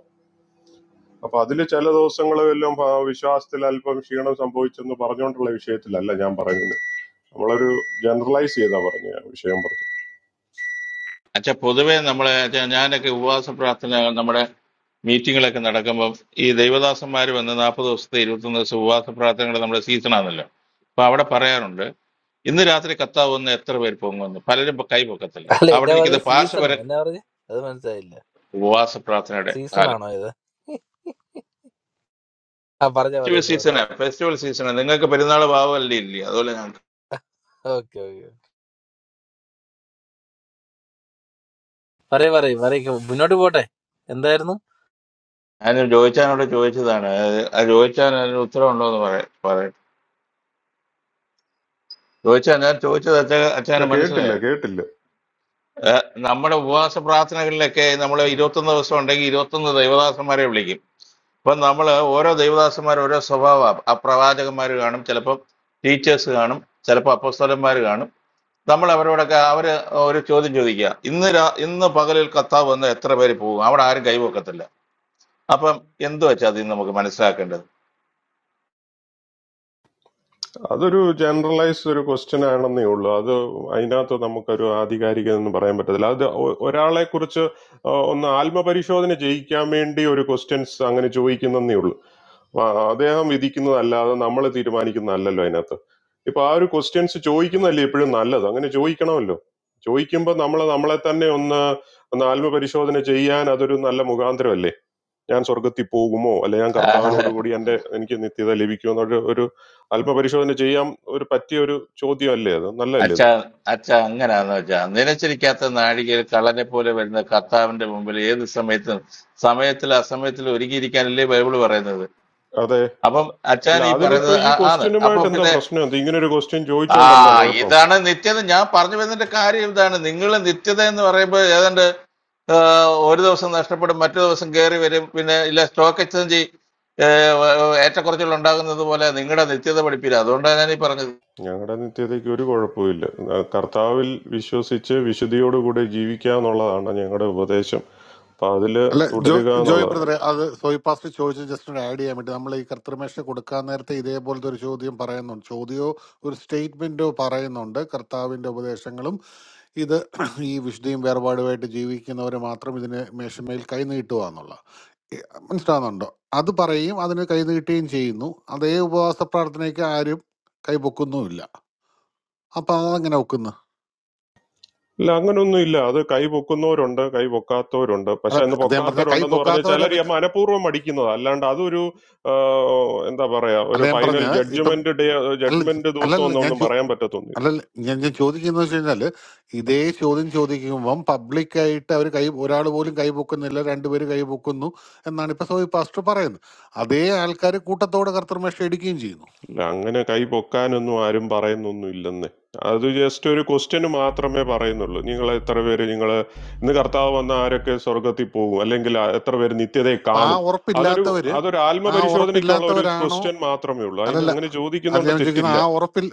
Speaker 19: അപ്പൊ അതിൽ ചില ദിവസങ്ങളിൽ എല്ലാം വിശ്വാസത്തിൽ അല്പം ക്ഷീണം സംഭവിച്ചെന്ന് പറഞ്ഞുകൊണ്ടുള്ള വിഷയത്തിലല്ല ഞാൻ പറയുന്നത് നമ്മളൊരു ജനറലൈസ് ചെയ്താ പറഞ്ഞ വിഷയം പറഞ്ഞു
Speaker 17: അച്ഛാ പൊതുവേ നമ്മളെ അച്ഛാ ഞാനൊക്കെ ഉപവാസ പ്രാർത്ഥന നമ്മുടെ മീറ്റിങ്ങിലൊക്കെ നടക്കുമ്പം ഈ ദൈവദാസന്മാർ വന്ന് നാൽപ്പത് ദിവസത്തെ ഇരുപത്തൊന്ന് ദിവസം ഉപവാസ പ്രാർത്ഥനകൾ നമ്മുടെ സീസണാണല്ലോ അപ്പൊ അവിടെ പറയാറുണ്ട് ഇന്ന് രാത്രി കത്താവ് വന്ന് എത്ര പേര് പൊങ്ങുമെന്ന് പലരും ഇപ്പൊ കൈ പൊക്കത്തില്ല
Speaker 18: അല്ല
Speaker 17: അവിടെ
Speaker 18: എന്നാ
Speaker 17: ഇരിക്കുന്ന
Speaker 18: പറയുക
Speaker 17: പാർശ്വവര
Speaker 18: സീസണോ എന്നാ പറഞ്ഞ അത് മനസ്സിലായില്ല
Speaker 17: ഉപവാസ പ്രാർത്ഥനയുടെ
Speaker 18: സീസൺ
Speaker 17: കാലം
Speaker 18: ആണോ ഇത് ആ പറഞ്ഞ
Speaker 17: ഫെസ്റ്റിവൽ
Speaker 18: പറഞ്ഞു സോറി
Speaker 17: സീസണാ ഫെസ്റ്റിവൽ സീസണാ നിങ്ങൾക്ക് പെരുന്നാൾ ഭാവമല്ലേ ഇല്ലേ അതുപോലെ ഞങ്ങൾക്ക്
Speaker 18: ഓക്കെ ഓക്കെ. പറയ് പറയ് പറയ് മുന്നോട്ട് പോട്ടെ എന്തായിരുന്നു
Speaker 17: ഞാൻ ജോയിച്ചാനോട് ചോദിച്ചതാണ് അത് ആ ജോയിച്ചാൻ അതിന് ഉത്തരവുണ്ടോ എന്ന് പറയാ പറയട്ടെ ജോയിച്ചാൻ ഞാൻ ചോദിച്ചത് അച്ഛ
Speaker 19: ഇല്ല
Speaker 17: അച്ഛാന്
Speaker 19: കേട്ടില്ല
Speaker 17: മനസ്സിലായോ
Speaker 19: കേട്ടില്ല
Speaker 17: ഏഹ് നമ്മുടെ ഉപവാസ പ്രാർത്ഥനകളിലൊക്കെ നമ്മൾ ഇരുപത്തൊന്ന് ദിവസം ഉണ്ടെങ്കിൽ ഇരുപത്തൊന്ന് ദൈവദാസന്മാരെ വിളിക്കും അപ്പൊ നമ്മൾ ഓരോ ദൈവദാസന്മാർ ഓരോ സ്വഭാവ ആ പ്രവാചകന്മാർ കാണും ചിലപ്പോൾ ടീച്ചേഴ്സ് കാണും ചിലപ്പോൾ അപ്പസ്തലന്മാർ കാണും നമ്മൾ അവരോടൊക്കെ അവർ ഒരു ചോദ്യം ചോദിക്കുക ഇന്ന് രാ- ഇന്ന് പകലിൽ കത്താവ് വന്ന് എത്ര പേര് പോകും അവിടെ ആരും കൈവക്കത്തില്ല അപ്പം എന്ത് വെച്ചാൽ അതിൽ നിന്ന് നമുക്ക് മനസ്സിലാക്കേണ്ടത്
Speaker 19: അതൊരു ജനറലൈസ്ഡ് ഒരു ക്വസ്റ്റ്യൻ ആണെന്നേ ഉള്ളൂ അത് അതിനകത്ത് നമുക്കൊരു ആധികാരികത എന്ന് പറയാൻ പറ്റത്തില്ല അത് ഒ- ഒരാളെ കുറിച്ച് ഒന്ന് ആത്മപരിശോധന ചെയ്യിക്കാൻ വേണ്ടി ഒരു ക്വസ്റ്റ്യൻസ് അങ്ങനെ ചോദിക്കുന്നേ ഉള്ളൂ ആ, അദ്ദേഹം വിധിക്കുന്നതല്ലാതെ നമ്മൾ തീരുമാനിക്കുന്നതല്ലല്ലോ അതിനകത്ത് ഇപ്പൊ ആ ഒരു ക്വസ്റ്റ്യൻസ് ചോദിക്കുന്നതല്ലേ എപ്പോഴും നല്ലത് അങ്ങനെ ചോദിക്കണമല്ലോ ചോദിക്കുമ്പോൾ നമ്മൾ നമ്മളെ തന്നെ ഒന്ന് ഒന്ന് ആത്മപരിശോധന ചെയ്യാൻ അതൊരു നല്ല മുഖാന്തരമല്ലേ ഞാൻ സ്വർഗത്തിൽ പോകുമോ അല്ലെ ഞാൻ കർത്താവിനോടുകൂടി എൻ്റെ എനിക്ക് നിത്യത ലഭിക്കുമോ എന്നൊരു ഒരു അല്പപരിശോധന ചെയ്യാൻ ഒരു പറ്റിയ ഒരു ചോദ്യമല്ലേ അത് നല്ലല്ലേ
Speaker 17: അച്ഛ
Speaker 19: ഇത്
Speaker 17: അച്ഛ അങ്ങനാന്ന് വെച്ചാ നിലച്ചിരിക്കാത്ത നാഴികയിൽ കള്ളനെ പോലെ വരുന്ന കർത്താവിന്റെ മുമ്പിൽ ഏത് സമയത്തും സമയത്തിൽ അസമയത്തിൽ ഒരുങ്ങിയിരിക്കാനല്ലേ ബൈബിൾ പറയുന്നത്
Speaker 19: അതെ
Speaker 17: അപ്പം അച്ഛൻ
Speaker 19: അല്ല
Speaker 17: ഈ
Speaker 19: അതിനിപ്പോ
Speaker 17: പറയുന്നത്
Speaker 19: ഈ
Speaker 17: ആ- ആണ് അപ്പൊ
Speaker 19: ക്വസ്റ്റ്യനുമായിട്ട് എന്താ
Speaker 17: പിന്നെ
Speaker 19: പ്രശ്നം എന്താ ഇങ്ങനെ ഒരു ക്വസ്റ്റ്യൻ
Speaker 17: ആ
Speaker 19: ചോദിച്ചോണ്ട് എന്താ കുഴപ്പം
Speaker 17: ഇതാണ് നിത്യത ഞാൻ പറഞ്ഞു വരുന്നതിന്റെ കാര്യം ഇതാണ് നിങ്ങൾ നിത്യത എന്ന് പറയുമ്പോൾ ഏതാണ്ട് ആ, ഒരു ദിവസം നഷ്ടപ്പെടും മറ്റു ദിവസം കയറി വരും പിന്നെ ഇല്ല സ്റ്റോക്ക് എക്സ്ചേഞ്ച് ഏറ്റക്കുറച്ചിൽ ഉണ്ടാകുന്നത് പോലെ നിങ്ങളുടെ നിത്യത പഠിപ്പില്ല അതുകൊണ്ടാണ് ഞാൻ ഈ പറഞ്ഞത്
Speaker 19: ഞങ്ങളുടെ നിത്യതയ്ക്ക് ഒരു കുഴപ്പമില്ല കർത്താവിൽ വിശ്വസിച്ച് വിശുദ്ധിയോടുകൂടി ജീവിക്കുക എന്നുള്ളതാണ് ഞങ്ങളുടെ ഉപദേശം അപ്പൊ അതില്
Speaker 11: അല്ല ജോ
Speaker 19: തുടരുക
Speaker 11: ജോയ്
Speaker 19: എന്നുള്ളതാണ്
Speaker 11: ബ്രദറെ അത് സോയി പാസ്റ്റ് ചോദിച്ച് ജസ്റ്റ് ഒന്ന് ആഡ് ചെയ്യാൻ വേണ്ടി നമ്മൾ ഈ കർത്തൃമേഷന് കൊടുക്കാൻ നേരത്തെ ഇതേപോലത്തെ ഒരു ചോദ്യം പറയുന്നുണ്ട് ചോദ്യമോ ഒരു സ്റ്റേറ്റ്മെന്റോ പറയുന്നുണ്ട് കർത്താവിന്റെ ഉപദേശങ്ങളും ഇത് ഈ വിശുദ്ധിയും വേർപാടുമായിട്ട് ജീവിക്കുന്നവർ മാത്രം ഇതിന് മേശമേൽ കൈനീട്ടുക എന്നുള്ള ഈ- മനസ്സിലാകുന്നുണ്ടോ അത് പറയും അതിന് കൈനീട്ടുകയും ചെയ്യുന്നു അതേ ഉപവാസ പ്രാർത്ഥനയ്ക്ക് ആരും കൈ പൊക്കുന്നുമില്ല അപ്പൊ അതെങ്ങനെ ഒക്കുന്നു
Speaker 19: ഇല്ല അങ്ങനൊന്നും ഇല്ല അത് കൈ പൊക്കുന്നവരുണ്ട് കൈ പൊക്കാത്തവരുണ്ട്
Speaker 11: അല്ല
Speaker 19: പക്ഷെ അന്ന്
Speaker 11: അദ്ദേഹം പറഞ്ഞ കൈ
Speaker 19: പൊക്കാത്തവരുണ്ടെന്ന് പറഞ്ഞാൽ
Speaker 11: പൊക്കാത്തവരെ
Speaker 19: ചിലർ ഈ
Speaker 11: പറ്റി
Speaker 19: മനഃപൂർവ്വം അടിക്കുന്നതാ അല്ലാണ്ട് അതൊരു ആ, എന്താ പറയാ
Speaker 11: അല്ല
Speaker 19: ഒരു
Speaker 11: ഞാൻ പറഞ്ഞ
Speaker 19: ഫൈനൽ
Speaker 11: ഇപ്പം
Speaker 19: ജഡ്ജ്മെന്റ് ഡേ
Speaker 11: അല്ല
Speaker 19: ജഡ്ജ്മെന്റ് ദിവസം
Speaker 11: അല്ലല്ല
Speaker 19: ഒന്നും
Speaker 11: ഞാൻ
Speaker 19: ഒന്നും
Speaker 11: ചോ-
Speaker 19: പറയാൻ പറ്റത്തൊന്നുമില്ല
Speaker 11: അല്ലല്ല ഞാൻ ഞാൻ ചോദിക്കുന്നത് വെച്ച് കഴിഞ്ഞാല് ഇതേ ചോദ്യം ചോദിക്കുമ്പം പബ്ലിക്കായിട്ട് അവർ കൈ ഒരാൾ പോലും കൈ പൊക്കുന്നില്ല രണ്ടുപേര് കൈ പൊക്കുന്നു എന്നാണ് ഇപ്പൊ സോയി പാസ്റ്റർ പറയുന്നത് അതേ ആൾക്കാർ കൂട്ടത്തോടെ കർത്തർമേഷ എടുക്കുകയും ചെയ്യുന്നു
Speaker 19: ഇല്ല അങ്ങനെ കൈ പൊക്കാനൊന്നും ആരും പറയുന്നൊന്നും ഇല്ലെന്നേ അത് ജസ്റ്റ് ഒരു ക്വസ്റ്റ്യന് മാത്രമേ പറയുന്നുള്ളൂ നിങ്ങൾ എത്ര പേര് നിങ്ങൾ ഇന്ന് കർത്താവ് വന്ന ആരൊക്കെ സ്വർഗത്തിൽ പോകും അല്ലെങ്കിൽ ആ- എത്ര പേര് നിത്യതയെ
Speaker 11: അപ്പൊ ആ
Speaker 19: കാണും അതൊരു
Speaker 11: ഉറപ്പില്ലാത്തവര്
Speaker 19: അതൊരു
Speaker 11: ആ
Speaker 19: ആത്മപരിശോധനയ്ക്കുള്ള ഒരു
Speaker 11: ഉറപ്പില്ലാത്തവരാണോ
Speaker 19: ക്വസ്റ്റ്യൻ മാത്രമേ ഉള്ളൂ അതിന്
Speaker 11: അല്ലല്ല
Speaker 19: അങ്ങനെ
Speaker 11: അത്
Speaker 19: ചോദിക്കുന്നതുകൊണ്ട്
Speaker 11: ഞാൻ ചോദിക്കുന്നത്
Speaker 19: തെറ്റില്ല
Speaker 11: ആ ഉറപ്പിൽ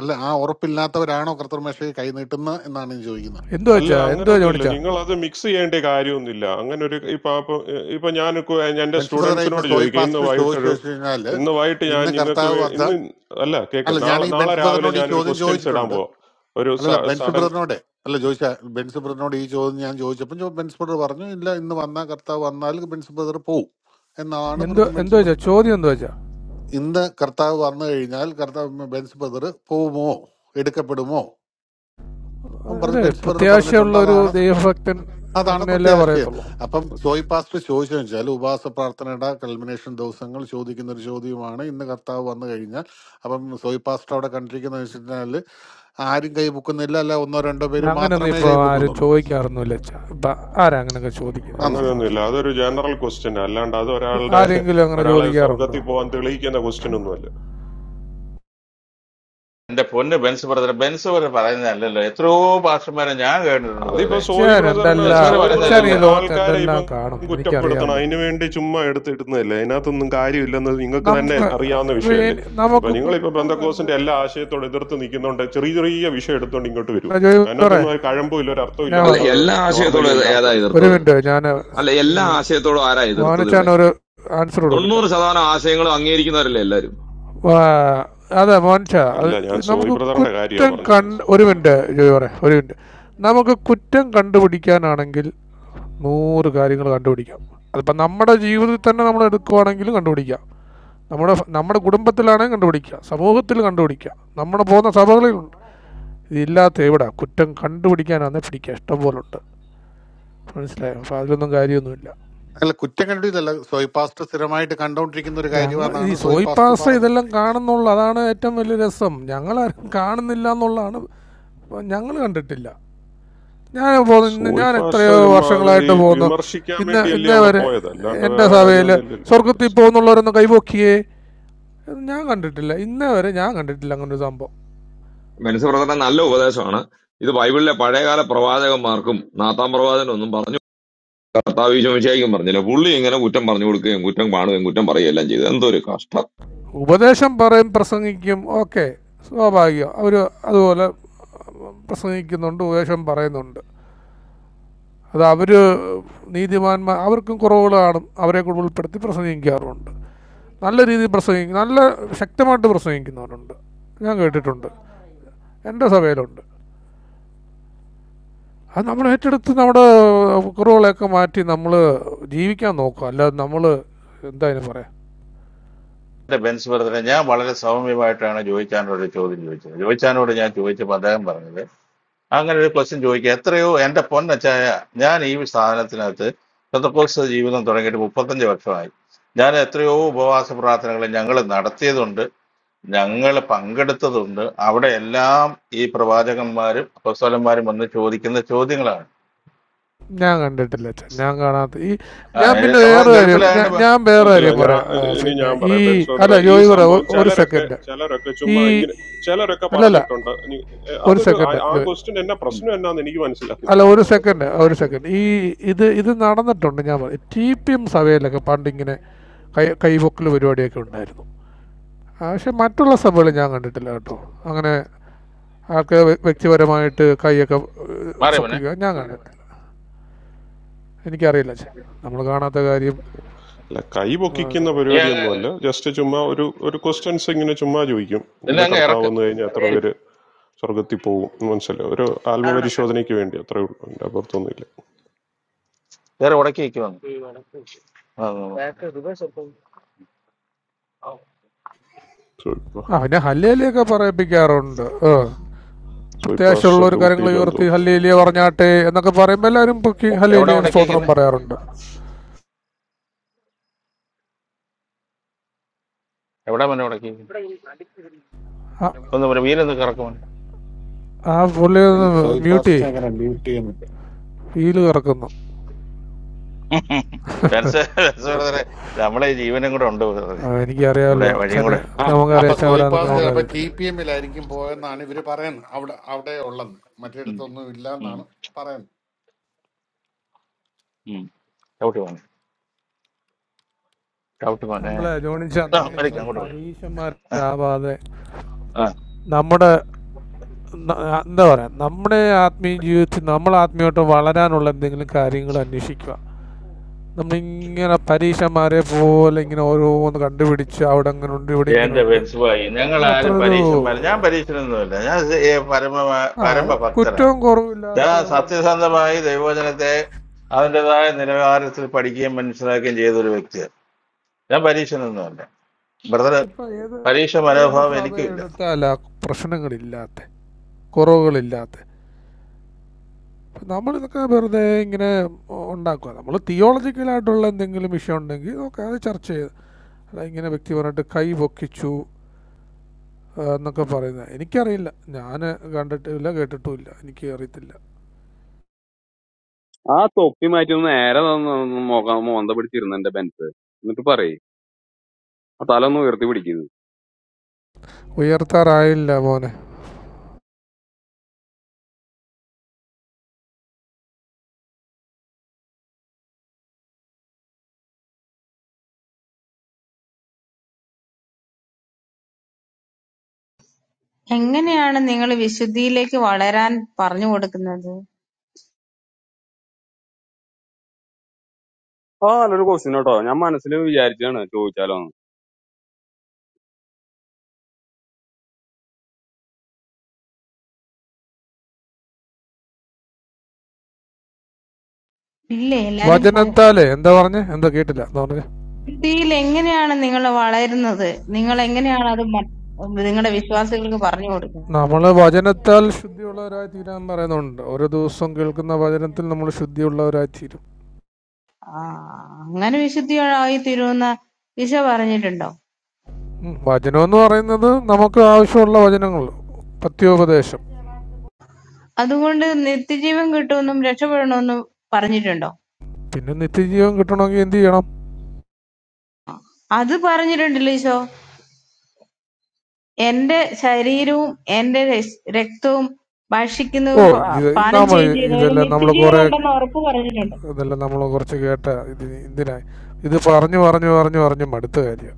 Speaker 11: അല്ല ആ ഉറപ്പില്ലാത്തവരാണോ കർത്തർമേഷയെ കൈ നീട്ടുന്നത് എന്നാണ് ഞാൻ ചോദിക്കുന്നത്
Speaker 20: എന്തോ
Speaker 19: അല്ല
Speaker 20: വെച്ചാ എന്തോ
Speaker 19: അങ്ങനൊന്നുമില്ല
Speaker 20: ചോണിച്ചാ
Speaker 19: നിങ്ങൾ അത് മിക്സ് ചെയ്യേണ്ട കാര്യമൊന്നുമില്ല അങ്ങനെ ഒരു ഇപ്പൊ അപ്പൊ ഇപ്പൊ ഞാൻ എൻ്റെ
Speaker 11: ബെൻസ് ബ്രദറെ ഇപ്പൊ
Speaker 19: സ്റ്റുഡൻസിനോട്
Speaker 11: സോയി
Speaker 19: ചോദിക്കും ഇന്ന്
Speaker 11: പാസ്റ്റർ ചോദിച്ചു
Speaker 19: വൈകിട്ടൊരു
Speaker 11: വെച്ച് കഴിഞ്ഞാല്
Speaker 19: ഇന്ന് വൈകിട്ട് ഞാൻ
Speaker 11: ഇന്ന്
Speaker 19: നിങ്ങൾക്ക്
Speaker 11: കർത്താവ്
Speaker 19: വേ-
Speaker 11: വധ
Speaker 19: ഇന്ന് അല്ല കേക്ക്
Speaker 11: അല്ല ഞാൻ
Speaker 19: നാളെ
Speaker 11: ഈ
Speaker 19: നാളെ
Speaker 11: ബെൻസ്
Speaker 19: രാവിലെ
Speaker 11: ബ്രദറിനോട് ഈ
Speaker 19: ഞാനൊരു
Speaker 11: ചോദ്യം
Speaker 19: ക്വസ്റ്റ്യൻസ് ഇടാൻ
Speaker 11: ചോദിച്ചിട്ടുണ്ട്
Speaker 19: പോവാം ഒരു
Speaker 11: അല്ലല്ല ബെൻസ്
Speaker 19: സഡൻ
Speaker 11: ബ്രദറിനോട് അല്ല ചോദിച്ച ബെൻസ് ബ്രദറിനോട് ഈ ചോദ്യം ഞാൻ ചോദിച്ചപ്പോൾ ചോ- ബെൻസ് ബ്രദർ പറഞ്ഞു ഇല്ല ഇന്ന് വന്ന കർത്താവ് വന്നാൽ ബെൻസ് ബ്രദർ പോവും എന്നാണ്
Speaker 20: എന്തോ
Speaker 11: പ്രതി
Speaker 20: എന്തോ
Speaker 11: ബെൻസ്
Speaker 20: വെച്ചാ
Speaker 11: ബ്രദർ
Speaker 20: ചോദ്യം എന്തോ വെച്ചാ
Speaker 11: ഇന്ന് കർത്താവ് വന്നു കഴിഞ്ഞാൽ കർത്താവ് ബെൻസ് ബ്രദർ പോവുമോ എടുക്കപ്പെടുമോ അവൻ പറഞ്ഞു
Speaker 20: അതെ
Speaker 11: ബെൻസ് ബ്രദർ പറഞ്ഞിട്ടുണ്ട്
Speaker 20: പ്രത്യാശയുള്ള ഒരു
Speaker 11: അതാണ്
Speaker 20: ദൈവഭക്തൻ
Speaker 11: അതാണ്
Speaker 20: അങ്ങനെയല്ലേ
Speaker 11: പ്രത്യാശയം
Speaker 20: പറയത്തുള്ളൂ
Speaker 11: അപ്പം സോയി പാസ്റ്റ് ചോദിച്ചതെന്ന് വെച്ചാൽ ഉപവാസ പ്രാർത്ഥനയുടെ കൽമിനേഷൻ ദിവസങ്ങൾ ചോദിക്കുന്ന ഒരു ചോദ്യമാണ് ഇന്ന് കർത്താവ് വന്നു കഴിഞ്ഞാൽ അപ്പം സോയി പാസ്റ്റ് അവിടെ കണ്ടിരിക്കുന്നത് വെച്ചിട്ടുണ്ടെങ്കിൽ ആരും കൈ പൊക്കുന്നില്ല അല്ല ഒന്നോ രണ്ടോ പേര്
Speaker 20: അങ്ങനെയൊന്നും
Speaker 11: മാത്രമേ
Speaker 20: ഇപ്പൊ
Speaker 11: കൈ
Speaker 20: ആരും
Speaker 11: പൊക്കുന്നുള്ളൂ
Speaker 20: ചോദിക്കാറൊന്നുമില്ല അച്ഛാ ഇപ്പൊ ആരാ അങ്ങനെയൊക്കെ ചോദിക്കുന്നത് ചുമ്മാ അത്.
Speaker 19: അങ്ങനെയൊന്നുമില്ല അതൊരു ജനറൽ ക്വസ്റ്റ്യൻ അല്ലാണ്ട് അത് ഒരാളുടെ
Speaker 20: ആരെങ്കിലും അങ്ങനെ
Speaker 19: ഒരാളെ
Speaker 20: ചോദിക്കാറുണ്ടോ
Speaker 19: സ്വർഗത്തിൽ പോകാൻ തെളിയിക്കുന്ന ക്വസ്റ്റ്യൻ ഒന്നുമല്ല
Speaker 17: എന്റെ പൊന്ന് ബെൻസ് ബ്രദറെ ബെൻസ് ബ്രദർ പറയുന്നതല്ലല്ലോ എത്രയോ ഭാഷമാരെ ഞാൻ കേട്ടിട്ടുണ്ട്
Speaker 19: അതിപ്പോ
Speaker 17: ബ്രദറെ
Speaker 19: സോയി
Speaker 20: അച്ഛൻ
Speaker 19: ബ്രദറിന്
Speaker 17: ബെൻസ്
Speaker 20: എന്തെല്ലാം
Speaker 17: ബ്രദർ
Speaker 19: സോയി
Speaker 20: അച്ഛൻ ഈ
Speaker 19: ബ്രദറിന്
Speaker 17: പറയുന്നതല്ലല്ലോ
Speaker 20: ലോകത്ത്
Speaker 19: ആൾക്കാരെ
Speaker 20: എന്തെല്ലാം
Speaker 19: ഇപ്പം
Speaker 20: കാണും
Speaker 19: കുറ്റപ്പെടുത്തണം
Speaker 20: എനിക്കറിയാമല്ലോ
Speaker 19: അതിനു വേണ്ടി ചുമ്മാ എടുത്തിടുന്നതല്ലേ അതിനകത്തൊന്നും കാര്യമില്ലെന്ന് നിങ്ങൾക്ക് തന്നെ
Speaker 20: നമുക്ക്
Speaker 19: അറിയാവുന്ന
Speaker 20: ഇപ്പൊ
Speaker 19: വിഷയമല്ലേ
Speaker 20: ഇനി-
Speaker 19: ഇപ്പൊ
Speaker 20: നമുക്ക്
Speaker 19: നിങ്ങളിപ്പോ
Speaker 20: കുറ്റം കണ്ട്
Speaker 19: ബന്ധക്കോസിന്റെ എല്ലാ ആശയത്തോട് എതിർത്ത് നിൽക്കുന്നതുകൊണ്ട് ചെറിയ ചെറിയ വിഷയം എടുത്തുകൊണ്ട് ഇങ്ങോട്ട് വരും
Speaker 20: ജോയി പറ
Speaker 19: അതിനകത്തൊന്നും ഒരു കഴമ്പും ഇല്ല ഒരു അർത്ഥവും
Speaker 20: ഞാൻ
Speaker 4: അല്ല
Speaker 20: പറ
Speaker 19: ഇല്ലെന്നുള്ളത്
Speaker 4: എല്ലാ ആശയത്തോടും
Speaker 19: നോർമലി
Speaker 4: ഏത- ഏതാ
Speaker 19: എല്ലാവർക്കും അറിയാം
Speaker 20: ഒരു
Speaker 4: എതിർത്തത്
Speaker 20: മിനിറ്റ് ഞാൻ
Speaker 4: അല്ല എല്ലാ
Speaker 20: ഈ
Speaker 4: ആശയത്തോടും ആരാ എതിർത്തത്
Speaker 20: മോനച്ചാൻ
Speaker 4: ഇവിടെ
Speaker 20: ഒരു ആൻസർ കൊടുക്കട്ടെ
Speaker 4: തൊണ്ണൂറ് ശതമാനം ആശയങ്ങളും അംഗീകരിക്കുന്നവരല്ലേ എല്ലാവരും
Speaker 20: വാ- അതെ മോൻഷ അത്
Speaker 19: അല്ല ഞാൻ സോയി
Speaker 20: നമുക്ക്
Speaker 19: ബ്രദറിന്റെ കാര്യമാണ്
Speaker 20: കുറ്റം
Speaker 19: പറഞ്ഞത്
Speaker 20: കണ്ട് ഒരു മിനിറ്റ് ജോയി പറയാം ഒരു മിനിറ്റ് നമുക്ക് കുറ്റം കണ്ടുപിടിക്കാനാണെങ്കിൽ നൂറ് കാര്യങ്ങൾ കണ്ടുപിടിക്കാം അതിപ്പോൾ നമ്മുടെ ജീവിതത്തിൽ തന്നെ നമ്മൾ എടുക്കുവാണെങ്കിലും കണ്ടുപിടിക്കാം നമ്മുടെ നമ്മുടെ കുടുംബത്തിലാണെങ്കിൽ കണ്ടുപിടിക്കാം സമൂഹത്തിൽ കണ്ടുപിടിക്കാം നമ്മുടെ പോകുന്ന സഭകളിലുണ്ട് ഇതില്ലാത്ത എവിടെ കുറ്റം കണ്ടുപിടിക്കാനാണെന്ന് പിടിക്കുക ഇഷ്ടം പോലെ ഉണ്ട് മനസ്സിലായോ അപ്പോൾ അതിലൊന്നും കാര്യമൊന്നുമില്ല
Speaker 11: അല്ല കുറ്റം കണ്ടിട്ടല്ല സോയി പാസ്റ്റ് സ്ഥിരമായിട്ട് കണ്ടോണ്ടിരിക്കുന്ന ഒരു
Speaker 20: ഞങ്ങൾ ഈ
Speaker 11: കാര്യമാണെന്നാണ് സോയി
Speaker 20: സോയി
Speaker 11: പാസ്റ്റ്
Speaker 20: പാസ്റ്റർ
Speaker 11: പറഞ്ഞത്
Speaker 20: ഇതെല്ലാം കാണുന്നുള്ളു അതാണ് ഏറ്റവും വലിയ രസം ഞങ്ങളാരും കാണുന്നില്ല എന്നുള്ളതാണ് ഞങ്ങൾ കണ്ടിട്ടില്ല ഞാൻ പോകുന്നു ഇന്ന്
Speaker 19: സോയി
Speaker 20: ഞാൻ എത്രയോ
Speaker 19: പാസ്റ്റർ ചുമ്മാ അത് ഈ
Speaker 20: വർഷങ്ങളായിട്ട് പോകുന്നു
Speaker 19: വിമർശിക്കാൻ
Speaker 20: ഇന്ന്
Speaker 19: വേണ്ടിയല്ലേ
Speaker 20: ഇന്നേ
Speaker 19: അവിടെ
Speaker 20: വരെ
Speaker 19: പോയത് അല്ലാണ്ട്
Speaker 20: എൻ്റെ
Speaker 19: വേറെ
Speaker 20: സഭയിൽ
Speaker 19: കാര്യമൊന്നും ഇല്ലല്ലോ
Speaker 20: സ്വർഗത്തിൽ പോകുന്നുള്ളവരൊന്നും കൈപോക്കിയേ ഇത് ഞാൻ കണ്ടിട്ടില്ല ഇന്നേ വരെ ഞാൻ കണ്ടിട്ടില്ല അങ്ങനെ ഒരു സംഭവം
Speaker 4: മെൻസ് ബ്രദറിന്റെ നല്ല ഉപദേശമാണ് ഇത് ബൈബിളിലെ പഴയകാല പ്രവാചകന്മാർക്കും നാത്താം പ്രവാചകനും ഒന്നും പറഞ്ഞു കർത്താവ് ചോദിച്ചായിരിക്കും പറഞ്ഞില്ല പുള്ളി ഇങ്ങനെ കുറ്റം പറഞ്ഞു കൊടുക്കുകയും കുറ്റം കാണുകയും കുറ്റം പറയുകയും എല്ലാം ചെയ്തു എന്തൊരു കഷ്ടം
Speaker 20: ഉപദേശം പറയും പ്രസംഗിക്കും ഓക്കെ സ്വാഭാവികം അവർ അതുപോലെ പ്രസംഗിക്കുന്നുണ്ട് ഉപദേശം പറയുന്നുണ്ട് അത് അവർ നീതിമാന്മാർ അവർക്കും കുറവുകൾ കാണും അവരെ കൂടെ ഉൾപ്പെടുത്തി പ്രസംഗിക്കാറുമുണ്ട് നല്ല രീതിയിൽ പ്രസംഗിക്കും നല്ല ശക്തമായിട്ട് പ്രസംഗിക്കുന്നവരുണ്ട് ഞാൻ കേട്ടിട്ടുണ്ട് എൻ്റെ സഭയിലുണ്ട് അത് നമ്മൾ ഏറ്റെടുത്ത് നമ്മുടെ കുറവുകളെയൊക്കെ മാറ്റി നമ്മൾ ജീവിക്കാൻ നോക്കുക അല്ലാതെ നമ്മൾ എന്താ അതിന് പറയാം
Speaker 17: എന്റെ ബെൻസ് ബ്രദറെ ഞാൻ വളരെ സൗമ്യമായിട്ടാണ് ജോയിച്ചാനോട് ഒരു ചോദ്യം ചോദിച്ചത് ജോയിച്ചാനോട് ഞാൻ ചോദിച്ചപ്പോൾ അദ്ദേഹം പറഞ്ഞത് അങ്ങനെ ഒരു ക്വസ്റ്റ്യൻ ചോദിക്കുക എത്രയോ എന്റെ പൊന്നച്ചായ ഞാൻ ഈ സാധനത്തിനകത്ത് ശതകോസ ജീവിതം തുടങ്ങിയിട്ട് മുപ്പത്തഞ്ച് വർഷമായി ഞാൻ എത്രയോ ഉപവാസ പ്രാർത്ഥനകൾ ഞങ്ങൾ നടത്തിയതുണ്ട് ഞങ്ങൾ പങ്കെടുത്തതുണ്ട് അവിടെ എല്ലാം ഈ പ്രവാചകന്മാരും അപ്പസ്വലന്മാരും വന്ന് ചോദിക്കുന്ന ചോദ്യങ്ങളാണ്
Speaker 20: ഞാൻ കണ്ടിട്ടില്ല അച്ഛൻ ഞാൻ കാണാത്ത ഈ
Speaker 17: ആ
Speaker 20: ഞാൻ പിന്നെ
Speaker 17: ഏ- അവൻ
Speaker 20: വേറെ കാര്യം
Speaker 17: ഗൾഫിലായോണ്ട്
Speaker 20: ഞാൻ-
Speaker 17: പ-
Speaker 20: ഞാൻ വേറെ
Speaker 19: അല്ല
Speaker 20: കാര്യം
Speaker 19: ഞാൻ
Speaker 20: പറയാം ആ,
Speaker 19: ഇനി
Speaker 20: പിന്നെ
Speaker 19: ഞാൻ
Speaker 20: ഈ
Speaker 19: പറയാം
Speaker 20: അല്ല
Speaker 19: ബെൻസോദറെ ഈ
Speaker 20: ജോയ് പറ
Speaker 19: സംഭവം
Speaker 20: ഒരു
Speaker 19: ചിലരൊക്കെ
Speaker 20: സെക്കൻഡ്
Speaker 19: ചിലരൊക്കെ
Speaker 20: ഈ
Speaker 19: ചുമ്മാ ഇങ്ങനെ ചിലരൊക്കെ
Speaker 20: അല്ലല്ല
Speaker 19: പറഞ്ഞിട്ടുണ്ട് ഇനി, എ,
Speaker 20: ഒരു
Speaker 19: അതൊരു ആ
Speaker 20: സെക്കൻഡ്
Speaker 19: ആ
Speaker 20: ജോയ്
Speaker 19: ക്വസ്റ്റ്യൻ എന്നാ
Speaker 17: ഉം.
Speaker 19: പ്രശ്നം എന്നാന്ന് എനിക്ക്
Speaker 20: അല്ല
Speaker 19: മനസ്സിലാകുന്നില്ല
Speaker 20: ഒരു സെക്കൻഡ് ഒരു സെക്കൻഡ് ഈ ഇത് ഇത് നടന്നിട്ടുണ്ട് ഞാൻ പറ- ടി പി എം സഭയിലൊക്കെ പണ്ട് ഇങ്ങനെ കൈ കൈപൊക്കൽ പരിപാടിയൊക്കെ ഉണ്ടായിരുന്നു ആ, പക്ഷെ മറ്റുള്ള സഭകളിൽ ഞാൻ കണ്ടിട്ടില്ല കേട്ടോ അങ്ങനെ ആൾക്ക് വ്യ- വ്യക്തിപരമായിട്ട് കൈയൊക്കെ ഏഹ്,
Speaker 17: മാറി പിന്നെ
Speaker 20: പൊക്കുക ഞാൻ കണ്ടിട്ടില്ല എനിക്കറിയില്ല നമ്മൾ കാണാത്ത കാര്യം
Speaker 19: അല്ല കൈ
Speaker 20: ആ,
Speaker 19: പൊക്കിക്കുന്ന
Speaker 17: നീ അങ്ങ്
Speaker 19: പരിപാടിയൊന്നുമല്ല ജസ്റ്റ് ചുമ്മാ ഒരു ഒരു ക്വസ്റ്റ്യൻസ് ഇങ്ങനെ ചുമ്മാ ചോദിക്കും
Speaker 17: നിന്നെ
Speaker 19: ഇന്ന്
Speaker 17: അങ്ങ്
Speaker 19: കർത്താവ്
Speaker 17: ഇറക്ക്
Speaker 19: വന്നു കഴിഞ്ഞാൽ എത്ര
Speaker 17: ഇറക്കിയിട്ട്
Speaker 19: പേര് സ്വർഗത്തിൽ പോകും മനസ്സിലായി ഒരു ആത്മപരിശോധനയ്ക്ക് വേണ്ടി അത്രേ ഉള്ളൂ എൻ്റെ അപ്പുറത്തൊന്നുമില്ല
Speaker 17: വേറെ ഉടക്കി വെക്കുവാണ്
Speaker 19: സോ ഇപ്പൊ
Speaker 20: ആ പിന്നെ ഹല്ലേലിയൊക്കെ പറയിപ്പിക്കാറുണ്ട് ഏ
Speaker 19: സോ ഇപ്പൊ
Speaker 20: പ്രത്യാശയുള്ള ഒരു കരങ്ങൾ
Speaker 19: ഡ്യൂട്ടിയിലെന്തോ
Speaker 20: ഉയർത്തി ഹല്ലേലിയ പറഞ്ഞാട്ടെ എന്നൊക്കെ പറയുമ്പോൾ എല്ലാവരും പൊക്കി
Speaker 17: എവിടെ
Speaker 20: ഹല്ലേലിയ
Speaker 17: ഉടക്കി
Speaker 20: സ്തോത്രം
Speaker 17: വെക്കുന്നേ
Speaker 20: പറയാറുണ്ട്
Speaker 17: എവിടെ മോനെ ഉടക്കി വെക്കുന്നെ?
Speaker 20: ആ-
Speaker 17: ഒന്ന് പറ വീലൊന്ന് കറക്കുമോ
Speaker 20: ആ പുള്ളി
Speaker 11: ഈ
Speaker 20: ഒന്ന്
Speaker 11: സോയി
Speaker 20: മ്യൂട്ട്
Speaker 11: പാസ്റ്റ്
Speaker 20: ചെയ്യ്
Speaker 11: എങ്ങനെ മ്യൂട്ട് ചെയ്യുന്നു
Speaker 20: വീല് കറക്കുന്നു
Speaker 17: നമ്മളെ ഈ ജീവനും കൂടെ ഉണ്ട് ബ്രദറെ.
Speaker 20: ആ,
Speaker 17: നമ്മുടെ
Speaker 20: എനിക്കറിയാമല്ലോ
Speaker 17: വഴിയും
Speaker 20: അച്ഛന്
Speaker 17: കൂടെ
Speaker 11: ആ
Speaker 20: നമുക്കറിയാം
Speaker 11: അപ്പൊ
Speaker 20: അച്ഛൻ
Speaker 11: സോയി
Speaker 20: എവിടെയാണെന്നൊക്കെ
Speaker 17: ആ.
Speaker 11: പാസ്റ്റ് ചിലപ്പോ ടി
Speaker 20: നമുക്കറിയത്തില്ല
Speaker 11: പി എമ്മിലായിരിക്കും പോയെന്നാണ് ഇവര് പറയുന്നത് അവിടെ അവിടെ ഉള്ളത്
Speaker 17: ഉം.
Speaker 11: മറ്റിടത്തൊന്നും ഇല്ല
Speaker 17: ഉം.
Speaker 11: എന്നാണ് പറയുന്നത്
Speaker 17: ഉം. ചവിട്ടി പോണേ ചവിട്ടി പോണേ
Speaker 20: നമ്മളെ ജോണിച്ച
Speaker 17: ആ
Speaker 11: ഏ,
Speaker 17: വരയ്ക്ക്
Speaker 20: നമ്മളിങ്ങനെ
Speaker 11: സോയി
Speaker 17: അങ്ങോട്ട്
Speaker 11: പാ-
Speaker 17: പോണേ
Speaker 20: പരീക്ഷന്മാരാവാതെ
Speaker 17: ആ
Speaker 20: നമ്മുടെ ന- എന്താ പറയുക നമ്മുടെ ആത്മീയ ജീവിതത്തിൽ നമ്മൾ ആത്മീയമായിട്ട് വളരാനുള്ള എന്തെങ്കിലും കാര്യങ്ങൾ അന്വേഷിക്കുക നമ്മളിങ്ങനെ പരീക്ഷന്മാരെ പോലെ ഇങ്ങനെ ഓരോന്ന് കണ്ടുപിടിച്ച് അവിടെ അങ്ങനെ ഉണ്ട് ഇവിടെ ഇങ്ങനെ
Speaker 17: എന്റെ
Speaker 20: ഉണ്ട്
Speaker 17: ബെൻസ് ഭായി ഞങ്ങൾ
Speaker 20: അത് അത്ര
Speaker 17: ആരും
Speaker 20: ഒരു
Speaker 17: പരീക്ഷന്മാർ ഞാൻ പരീക്ഷനൊന്നുമില്ല ഞാൻ സ- ഏ, പരമ
Speaker 20: ആ
Speaker 17: പരമ ഭക്തരാ
Speaker 20: കുറ്റവും കുറവില്ലാത്ത
Speaker 17: ഞാൻ
Speaker 20: ഇവിടെ ഉണ്ട്
Speaker 17: സത്യസന്ധമായി ദൈവവചനത്തെ അതിൻ്റെതായ നിലവാരത്തിൽ പഠിക്കുകയും മനസ്സിലാക്കുകയും ചെയ്ത ഒരു വ്യക്തിയാണ് ഞാൻ പരീക്ഷ നിന്നുമല്ല ബ്രദർ
Speaker 20: ഇപ്പം ഏത്
Speaker 17: പരീക്ഷ
Speaker 20: ഏത്
Speaker 17: മനോഭാവം
Speaker 20: സഭ
Speaker 17: എനിക്കും ഇല്ല
Speaker 20: എടുത്താലും ആ പ്രശ്നങ്ങളില്ലാത്ത കുറവുകളില്ലാത്ത അപ്പം നമ്മളിതൊക്കെ വെറുതെ ഇങ്ങനെ ഉണ്ടാക്കുക നമ്മൾ തിയോളജിക്കലായിട്ടുള്ള എന്തെങ്കിലും വിഷയം ഉണ്ടെങ്കിൽ നമുക്ക് അത് ചർച്ച ചെയ്ത് അല്ല ഇങ്ങനെ വ്യക്തിപരമായിട്ട് കൈ പൊക്കിച്ചു ആ, എന്നൊക്കെ പറയുന്നത് എനിക്കറിയില്ല ഞാൻ കണ്ടിട്ടില്ല കേട്ടിട്ടുമില്ല എനിക്ക് അറിയത്തില്ല
Speaker 12: ആ തൊപ്പി മാറ്റി ഒന്ന് നേരെ തന്ന് ഒന്ന് മോക- മോന്ത പിടിച്ചിരുന്നു എന്റെ ബെൻസ് എന്നിട്ട് പറയ് ആ തല ഒന്ന് ഉയർത്തി പിടിക്കുന്നു
Speaker 20: ഉയർത്താറായില്ല മോനെ
Speaker 13: എങ്ങനെയാണ് നിങ്ങൾ വിശുദ്ധിയിലേക്ക് വളരാൻ പറഞ്ഞു കൊടുക്കുന്നത്?
Speaker 12: ആ നല്ലൊരു ക്വസ്റ്റ്യൻ കേട്ടോ ഞാൻ മനസ്സിൽ വിചാരിച്ചാണ് ചോദിച്ചാലോ
Speaker 13: ഇല്ലേ, എല്ലാരും പോയി.
Speaker 20: വചനത്താലേ എന്താ പറഞ്ഞേ എന്താ കേട്ടില്ല എന്താ പറഞ്ഞേ
Speaker 13: വിശുദ്ധിയിൽ എങ്ങനെയാണ് നിങ്ങൾ വളരുന്നത്? നിങ്ങൾ എങ്ങനെയാണ് അത് മ- നിങ്ങളുടെ വിശ്വാസികൾക്ക് പറഞ്ഞു കൊടുക്കുന്നത്?
Speaker 20: നമ്മൾ വചനത്താൽ ശുദ്ധിയുള്ളവരായി തീരാൻ പറയുന്നുണ്ട് ഓരോ ദിവസവും കേൾക്കുന്ന വചനത്തിൽ നമ്മൾ ശുദ്ധിയുള്ളവരായി തീരും
Speaker 13: ആ അങ്ങനെ വിശുദ്ധിയായി തീരുമെന്ന് ഈശോ പറഞ്ഞിട്ടുണ്ടോ?
Speaker 20: ഉം, വചനം എന്ന് പറയുന്നത് നമുക്ക് ആവശ്യമുള്ള വചനങ്ങൾ പത്യോപദേശം
Speaker 13: അതുകൊണ്ട് നിത്യജീവൻ കിട്ടുമെന്നും രക്ഷപ്പെടണമെന്നും പറഞ്ഞിട്ടുണ്ടോ?
Speaker 20: പിന്നെ നിത്യജീവൻ കിട്ടണമെങ്കിൽ എന്ത് ചെയ്യണം
Speaker 13: അത് പറഞ്ഞിട്ടുണ്ടല്ലോ ഈശോ. എന്റെ ശരീരവും എന്റെ രസ്- രക്തവും
Speaker 20: ഓ
Speaker 13: ഭക്ഷിക്കുന്നതും പ-
Speaker 20: ഇത്
Speaker 13: പാനം
Speaker 20: നമ്മൾ
Speaker 13: ചെയ്യുകയും ചെയ്യുന്നവന്
Speaker 20: ഇതെല്ലാം നമ്മൾ
Speaker 13: നിത്യജീവൻ
Speaker 20: കുറേ
Speaker 13: ഉണ്ടെന്ന് ഉറപ്പ് പറഞ്ഞിട്ടുണ്ട്.
Speaker 20: ഇതെല്ലാം നമ്മൾ കുറച്ച് കേട്ട ഇത് ഇതിനായി ഇത് പറഞ്ഞു പറഞ്ഞു പറഞ്ഞു പറഞ്ഞു മടുത്ത കാര്യം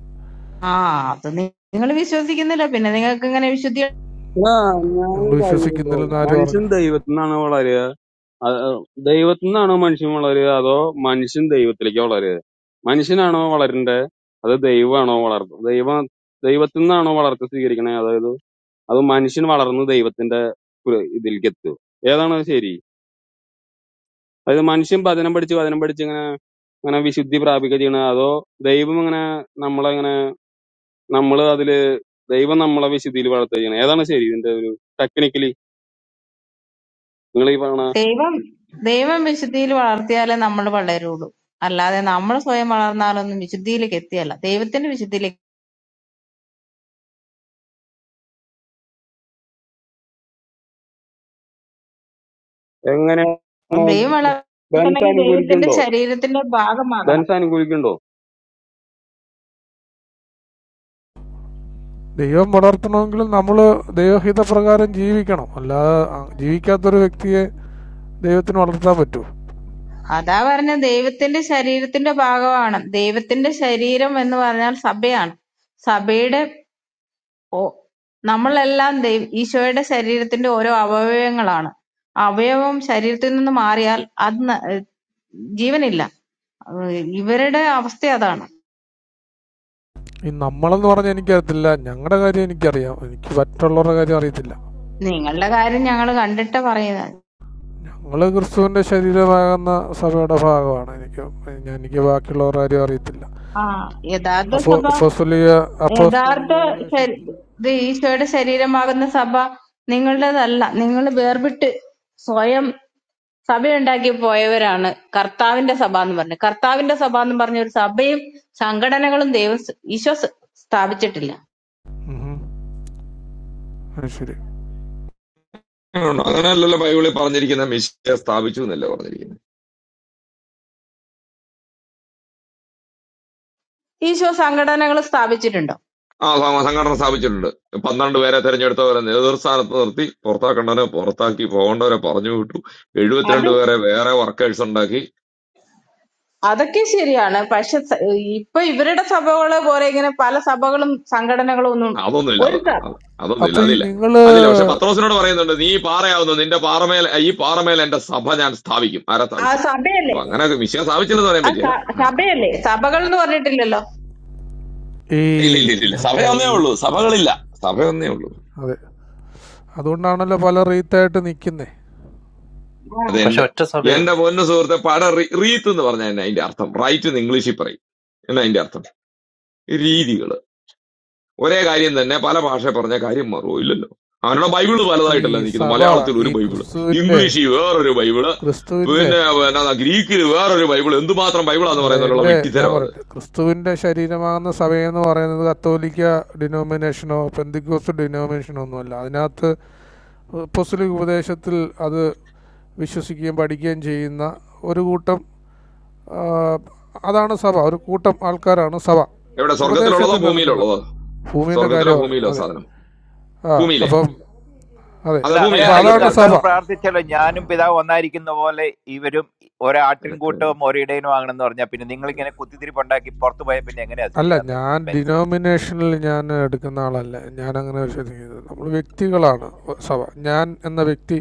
Speaker 13: ആ അത് നിങ്ങൾ വിശ്വസിക്കുന്നില്ല പിന്നെ നിങ്ങൾക്ക് ഇങ്ങനെ വിശുദ്ധി
Speaker 12: ആ ഞാൻ
Speaker 20: ഞങ്ങൾ
Speaker 12: കഴിഞ്ഞ-
Speaker 20: വിശ്വസിക്കുന്നില്ലെന്ന് ആര് പറഞ്ഞു
Speaker 12: മനുഷ്യൻ ദൈവത്തിൽ നിന്നാണ് വളരുക അത് ദൈവത്തിൽ നിന്നാണോ മനുഷ്യൻ വളരുക അതോ മനുഷ്യൻ ദൈവത്തിലേക്ക് വളരുക മനുഷ്യനാണോ വളരണ്ടേ അത് ദൈവമാണോ വളർത്തുന്നത് ദൈവം ദൈവത്തിൽ നിന്നാണോ വളർച്ച സ്വീകരിക്കണേ അതായത് അത് മനുഷ്യൻ വളർന്ന് ദൈവത്തിന്റെ ഒരു ഇതിലേക്ക് എത്തുക ഏതാണ് ശരി അതായത് മനുഷ്യൻ പതനം പഠിച്ച് പതനം പഠിച്ച് ഇങ്ങനെ ഇങ്ങനെ വിശുദ്ധി പ്രാപിക്കുക ചെയ്യണ അതോ ദൈവം ഇങ്ങനെ നമ്മളെ ഇങ്ങനെ നമ്മള് അതില് ദൈവം നമ്മളെ വിശുദ്ധിയിൽ വളർത്തുക ചെയ്യണം ഏതാണ് ശരി ഇതിന്റെ ഒരു ടെക്നിക്കലി നിങ്ങൾ ഈ പറയണ
Speaker 13: ദൈവം ദൈവം വിശുദ്ധിയിൽ വളർത്തിയാലേ നമ്മൾ വളരുള്ളൂ അല്ലാതെ നമ്മൾ സ്വയം വളർന്നാലൊന്നും വിശുദ്ധിയിലേക്ക് എത്തിയല്ല ദൈവത്തിന്റെ വിശുദ്ധിയിലേക്ക്
Speaker 12: എങ്ങനെ
Speaker 13: അപ്പം ദൈവം
Speaker 12: ബെൻസ്
Speaker 13: വളർത്തണമെങ്കിൽ ദൈവത്തിന്റെ
Speaker 12: അനുകൂലിക്കുണ്ടോ
Speaker 13: ശരീരത്തിന്റെ ഭാഗമാകണം
Speaker 12: ബെൻസ് അനുകൂലിക്കുണ്ടോ
Speaker 20: ദൈവം വളർത്തണമെങ്കിലും നമ്മൾ ദൈവഹിത പ്രകാരം ജീവിക്കണം അല്ലാതെ അ- ജീവിക്കാത്തൊരു വ്യക്തിയെ ദൈവത്തിന് വളർത്താൻ പറ്റുമോ
Speaker 13: അതാ പറഞ്ഞ ദൈവത്തിന്റെ ശരീരത്തിന്റെ ഭാഗമാണ് ദൈവത്തിന്റെ ശരീരം എന്ന് പറഞ്ഞാൽ സഭയാണ് സഭയുടെ ഓ- നമ്മളെല്ലാം ദൈവ ഈശോയുടെ ശരീരത്തിന്റെ ഓരോ അവയവങ്ങളാണ് അവയവം ശരീരത്തിൽ നിന്ന് മാറിയാൽ അത് ന- ഏഹ് ജീവനില്ല ഏഹ് ഇവരുടെ അവസ്ഥ അതാണ്
Speaker 20: ഈ നമ്മളെന്ന് പറഞ്ഞാൽ എനിക്കറിയത്തില്ല ഞങ്ങളുടെ കാര്യം എനിക്കറിയാം എനിക്ക് മറ്റുള്ളവരുടെ കാര്യം അറിയത്തില്ല
Speaker 13: നിങ്ങളുടെ കാര്യം ഞങ്ങൾ കണ്ടിട്ടാ പറയുന്നത്
Speaker 20: ഞങ്ങൾ ക്രിസ്തുവിൻ്റെ ശരീരമാകുന്ന സഭയുടെ ഭാഗമാണ് എനിക്ക് ഞാൻ എനിക്ക് ബാക്കിയുള്ളവർ ആരും അറിയത്തില്ല
Speaker 13: ആ യഥാർത്ഥ
Speaker 20: അപ്പോൾ
Speaker 13: സഭ
Speaker 20: അപ്പോസ്തോലിക അപ്പോസ്തോലിക
Speaker 13: യഥാർത്ഥ ശരി-
Speaker 20: ഉപദേശത്തിൽ
Speaker 13: ഇത് ഈശോയുടെ ശരീരമാകുന്ന സഭ നിങ്ങളുടേതല്ല. നിങ്ങൾ വേർപെട്ട് സ്വയം സഭയുണ്ടാക്കി പോയവരാണ് കർത്താവിന്റെ സഭ എന്ന് പറഞ്ഞത്. കർത്താവിന്റെ സഭ എന്ന് പറഞ്ഞ ഒരു സഭയും സംഘടനകളും ദൈവം സ് ഈശോ സ് സ്ഥാപിച്ചിട്ടില്ല.
Speaker 20: ഉം. അത് ശരി
Speaker 4: അങ്ങനെയല്ലല്ലോ ബൈബിളിൽ പറഞ്ഞിരിക്കുന്ന മിശ്രയെ സ്ഥാപിച്ചു എന്നല്ലേ പറഞ്ഞിരിക്കുന്നത്
Speaker 13: ഈശോ സംഘടനകൾ സ്ഥാപിച്ചിട്ടുണ്ടോ?
Speaker 4: ആ സ- സംഘടന സ്ഥാപിച്ചിട്ടുണ്ട് പന്ത്രണ്ട് പേരെ തെരഞ്ഞെടുത്തവരെ നേതൃസ്ഥാനത്ത് നിർത്തി പുറത്താക്കേണ്ടവരെ പുറത്താക്കി പോകേണ്ടവരെ പറഞ്ഞു വിട്ടു
Speaker 13: അത്
Speaker 4: എഴുപത്തിരണ്ട് പേരെ വേറെ വർക്കേഴ്സ് ഉണ്ടാക്കി
Speaker 13: അതൊക്കെ ശരിയാണ്. പക്ഷെ സ- ഇപ്പൊ ഇവരുടെ സഭകളെ പോലെ ഇങ്ങനെ പല സഭകളും സംഘടനകളും ഒന്നും
Speaker 4: അതൊന്നുമില്ല
Speaker 13: ഒരു
Speaker 4: അത്
Speaker 13: സഭ
Speaker 4: അത് അതൊന്നുമില്ല
Speaker 20: അപ്പോൾ ഈ
Speaker 4: അതില്ല
Speaker 20: നിങ്ങൾ
Speaker 4: അതില്ല പക്ഷെ പത്രോസിനോട് പറയുന്നുണ്ട് നീ ഈ പാറയാവുന്നു നിന്റെ പാറമേൽ ഈ പാറമേൽ എന്റെ സഭ ഞാൻ സ്ഥാപിക്കും ആരാ
Speaker 13: ആ
Speaker 4: സ്ഥാപിച്ചത്
Speaker 13: സഭ
Speaker 4: അപ്പൊ അങ്ങനെ മിശ്ര സ്ഥാപിച്ചില്ലെന്ന് പറയാൻ
Speaker 13: ആ
Speaker 4: പറ്റില്ല
Speaker 13: സ-
Speaker 4: ആ
Speaker 13: സഭയല്ലേ
Speaker 4: ഓക്കെ
Speaker 13: സഭകൾ എന്ന് പറഞ്ഞിട്ടില്ലല്ലോ.
Speaker 20: ഈ
Speaker 4: ഇല്ല ഇല്ല ഇല്ല
Speaker 20: ഈ
Speaker 4: ഇല്ല
Speaker 20: പിന്നെ
Speaker 4: സഭയൊന്നേ
Speaker 20: ഈ
Speaker 4: ഉള്ളൂ സഭകളില്ല സഭയൊന്നേ ഉള്ളൂ
Speaker 20: അതെ അതുകൊണ്ടാണല്ലോ പല റീത്തായിട്ട് നിൽക്കുന്നത്
Speaker 4: അത്
Speaker 18: പക്ഷെ
Speaker 4: എന്റെ
Speaker 18: ഒറ്റ
Speaker 4: എന്റെ
Speaker 18: സഭയല്ലേ
Speaker 4: പൊന്നു സുഹൃത്തെ പട റീത്ത് എന്ന് പറഞ്ഞ അതിന്റെ അർത്ഥം റൈറ്റ് എന്ന് ഇംഗ്ലീഷിൽ പറയും എന്നാ അതിന്റെ അർത്ഥം രീതികൾ ഒരേ കാര്യം തന്നെ പല ഭാഷ പറഞ്ഞ കാര്യം മാറുമോ ഇല്ലല്ലോ അവരുടെ ബൈബിള്
Speaker 20: ഈ
Speaker 4: പലതായിട്ടല്ല നിൽക്കുന്നത്
Speaker 20: സഭ
Speaker 4: മലയാളത്തിൽ
Speaker 20: ഈ
Speaker 4: ഒരു ബൈബിള്
Speaker 20: ക്രിസ്തുവിൻ്റെ
Speaker 4: ഇംഗ്ലീഷിൽ വേറൊരു ബൈബിള്
Speaker 20: ക്രിസ്തുവിൻ്റെ
Speaker 4: പിന്നെ എന്നാ ഗ്രീക്കിൽ വേറൊരു ബൈബിൾ എന്തുമാത്രം ബൈബിളാന്ന്
Speaker 20: അല്ല
Speaker 4: പറയുന്നതിലുള്ള
Speaker 20: എൻ്റെ ഞാൻ
Speaker 4: വിട്ടിത്തരം അത്
Speaker 20: പറയട്ടെ ക്രിസ്തുവിൻ്റെ ശരീരമാകുന്ന സഭയെന്ന് പറയുന്നത് കത്തോലിക്ക ഡിനോമിനേഷനോ പെന്തിക്കോസ് ഡിനോമിനേഷനോ ഒന്നുമല്ല അതിനകത്ത് അപ്പോസ്തലിക ഉപദേശത്തിൽ അത് വിശ്വസിക്കുകയും പഠിക്കുകയും ചെയ്യുന്ന ഒരു കൂട്ടം ആ, അതാണ് സഭ ഒരു കൂട്ടം ആൾക്കാരാണ് സഭ
Speaker 4: എവിടെ സ്വർഗത്തിലുള്ളതോ
Speaker 20: ഉപദേശത്തിൽ നൽകുന്നത്
Speaker 4: ഭൂമിയിലുള്ളതോ
Speaker 20: ഭൂമിയിലെ
Speaker 4: സ്വർഗത്തിലോ
Speaker 20: കാര്യം പറയുന്നത്
Speaker 4: ഭൂമിയിലോ
Speaker 20: അതെ
Speaker 4: സാധനം
Speaker 20: ആ
Speaker 4: ഭൂമിയിലെ
Speaker 20: അപ്പം അതെ
Speaker 4: അതെ
Speaker 21: അല്ല
Speaker 4: ഭൂമിയിലെ
Speaker 20: അപ്പോൾ
Speaker 21: അങ്ങനെയാണെങ്കിൽ
Speaker 4: ആയിക്കോട്ടെ
Speaker 20: അതാണ്
Speaker 4: ആയിക്കോട്ടെ
Speaker 20: സഭ
Speaker 21: കർത്താവ് പ്രാർത്ഥിച്ചല്ലോ ഞാനും പിതാവ് ഒന്നായിരിക്കുന്ന പോലെ ഇവരും
Speaker 4: നിനക്ക്
Speaker 21: ഒരാട്ടിൻകൂട്ടവും ഒരിടയനും ആകണമെന്ന് പറഞ്ഞാൽ പിന്നെ നിങ്ങൾ ഇങ്ങനെ കുത്തിത്തിരിപ്പുണ്ടാക്കി പുറത്തു പോയാൽ പിന്നെ എങ്ങനെയാ
Speaker 20: അല്ല
Speaker 21: ശരിയാന്ന്
Speaker 20: ഞാൻ
Speaker 21: ബെൻസ്
Speaker 20: ഡിനോമിനേഷനിൽ ഞാൻ എടുക്കുന്ന ആളല്ല ഞാൻ അങ്ങനെ വിശ്വസിക്കുന്നത് നമ്മൾ വ്യക്തികളാണ് സഭ ഞാൻ എന്ന വ്യക്തി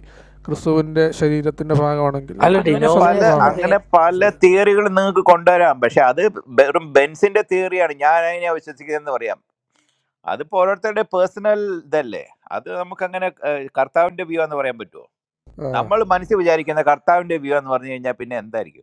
Speaker 20: ക്രിസ്തുവിൻ്റെ ശരീരത്തിൻ്റെ ഭാഗമാണെങ്കിൽ
Speaker 18: അല്ല
Speaker 20: ഒക്കെ ഞാൻ
Speaker 21: അങ്ങനെ പല
Speaker 20: സഭയുടെ
Speaker 18: ഡിനോമിനേഷൻ
Speaker 20: ഭാഗമാണ്
Speaker 18: എന്നൊക്കെ
Speaker 21: അങ്ങനെ പല
Speaker 20: മനസ്സിലായി
Speaker 21: തിയറികൾ നിങ്ങൾക്ക് കൊണ്ടുവരാം പക്ഷെ അത് വെറും ബെൻസിന്റെ തിയറിയാണ് ഞാൻ അതിനെ വിശ്വസിക്കുന്നതെന്ന് പറയാം അതിപ്പോ ഓരോരുത്തരുടെ പേഴ്സണൽ ഇതല്ലേ അത് നമുക്ക് അങ്ങനെ കർത്താവിന്റെ വ്യൂ എന്ന് പറയാൻ പറ്റുമോ
Speaker 20: ആ
Speaker 21: നമ്മൾ മനസ്സിൽ വിചാരിക്കുന്ന കർത്താവിന്റെ വ്യൂ എന്ന് പറഞ്ഞു കഴിഞ്ഞാൽ പിന്നെ എന്തായിരിക്കും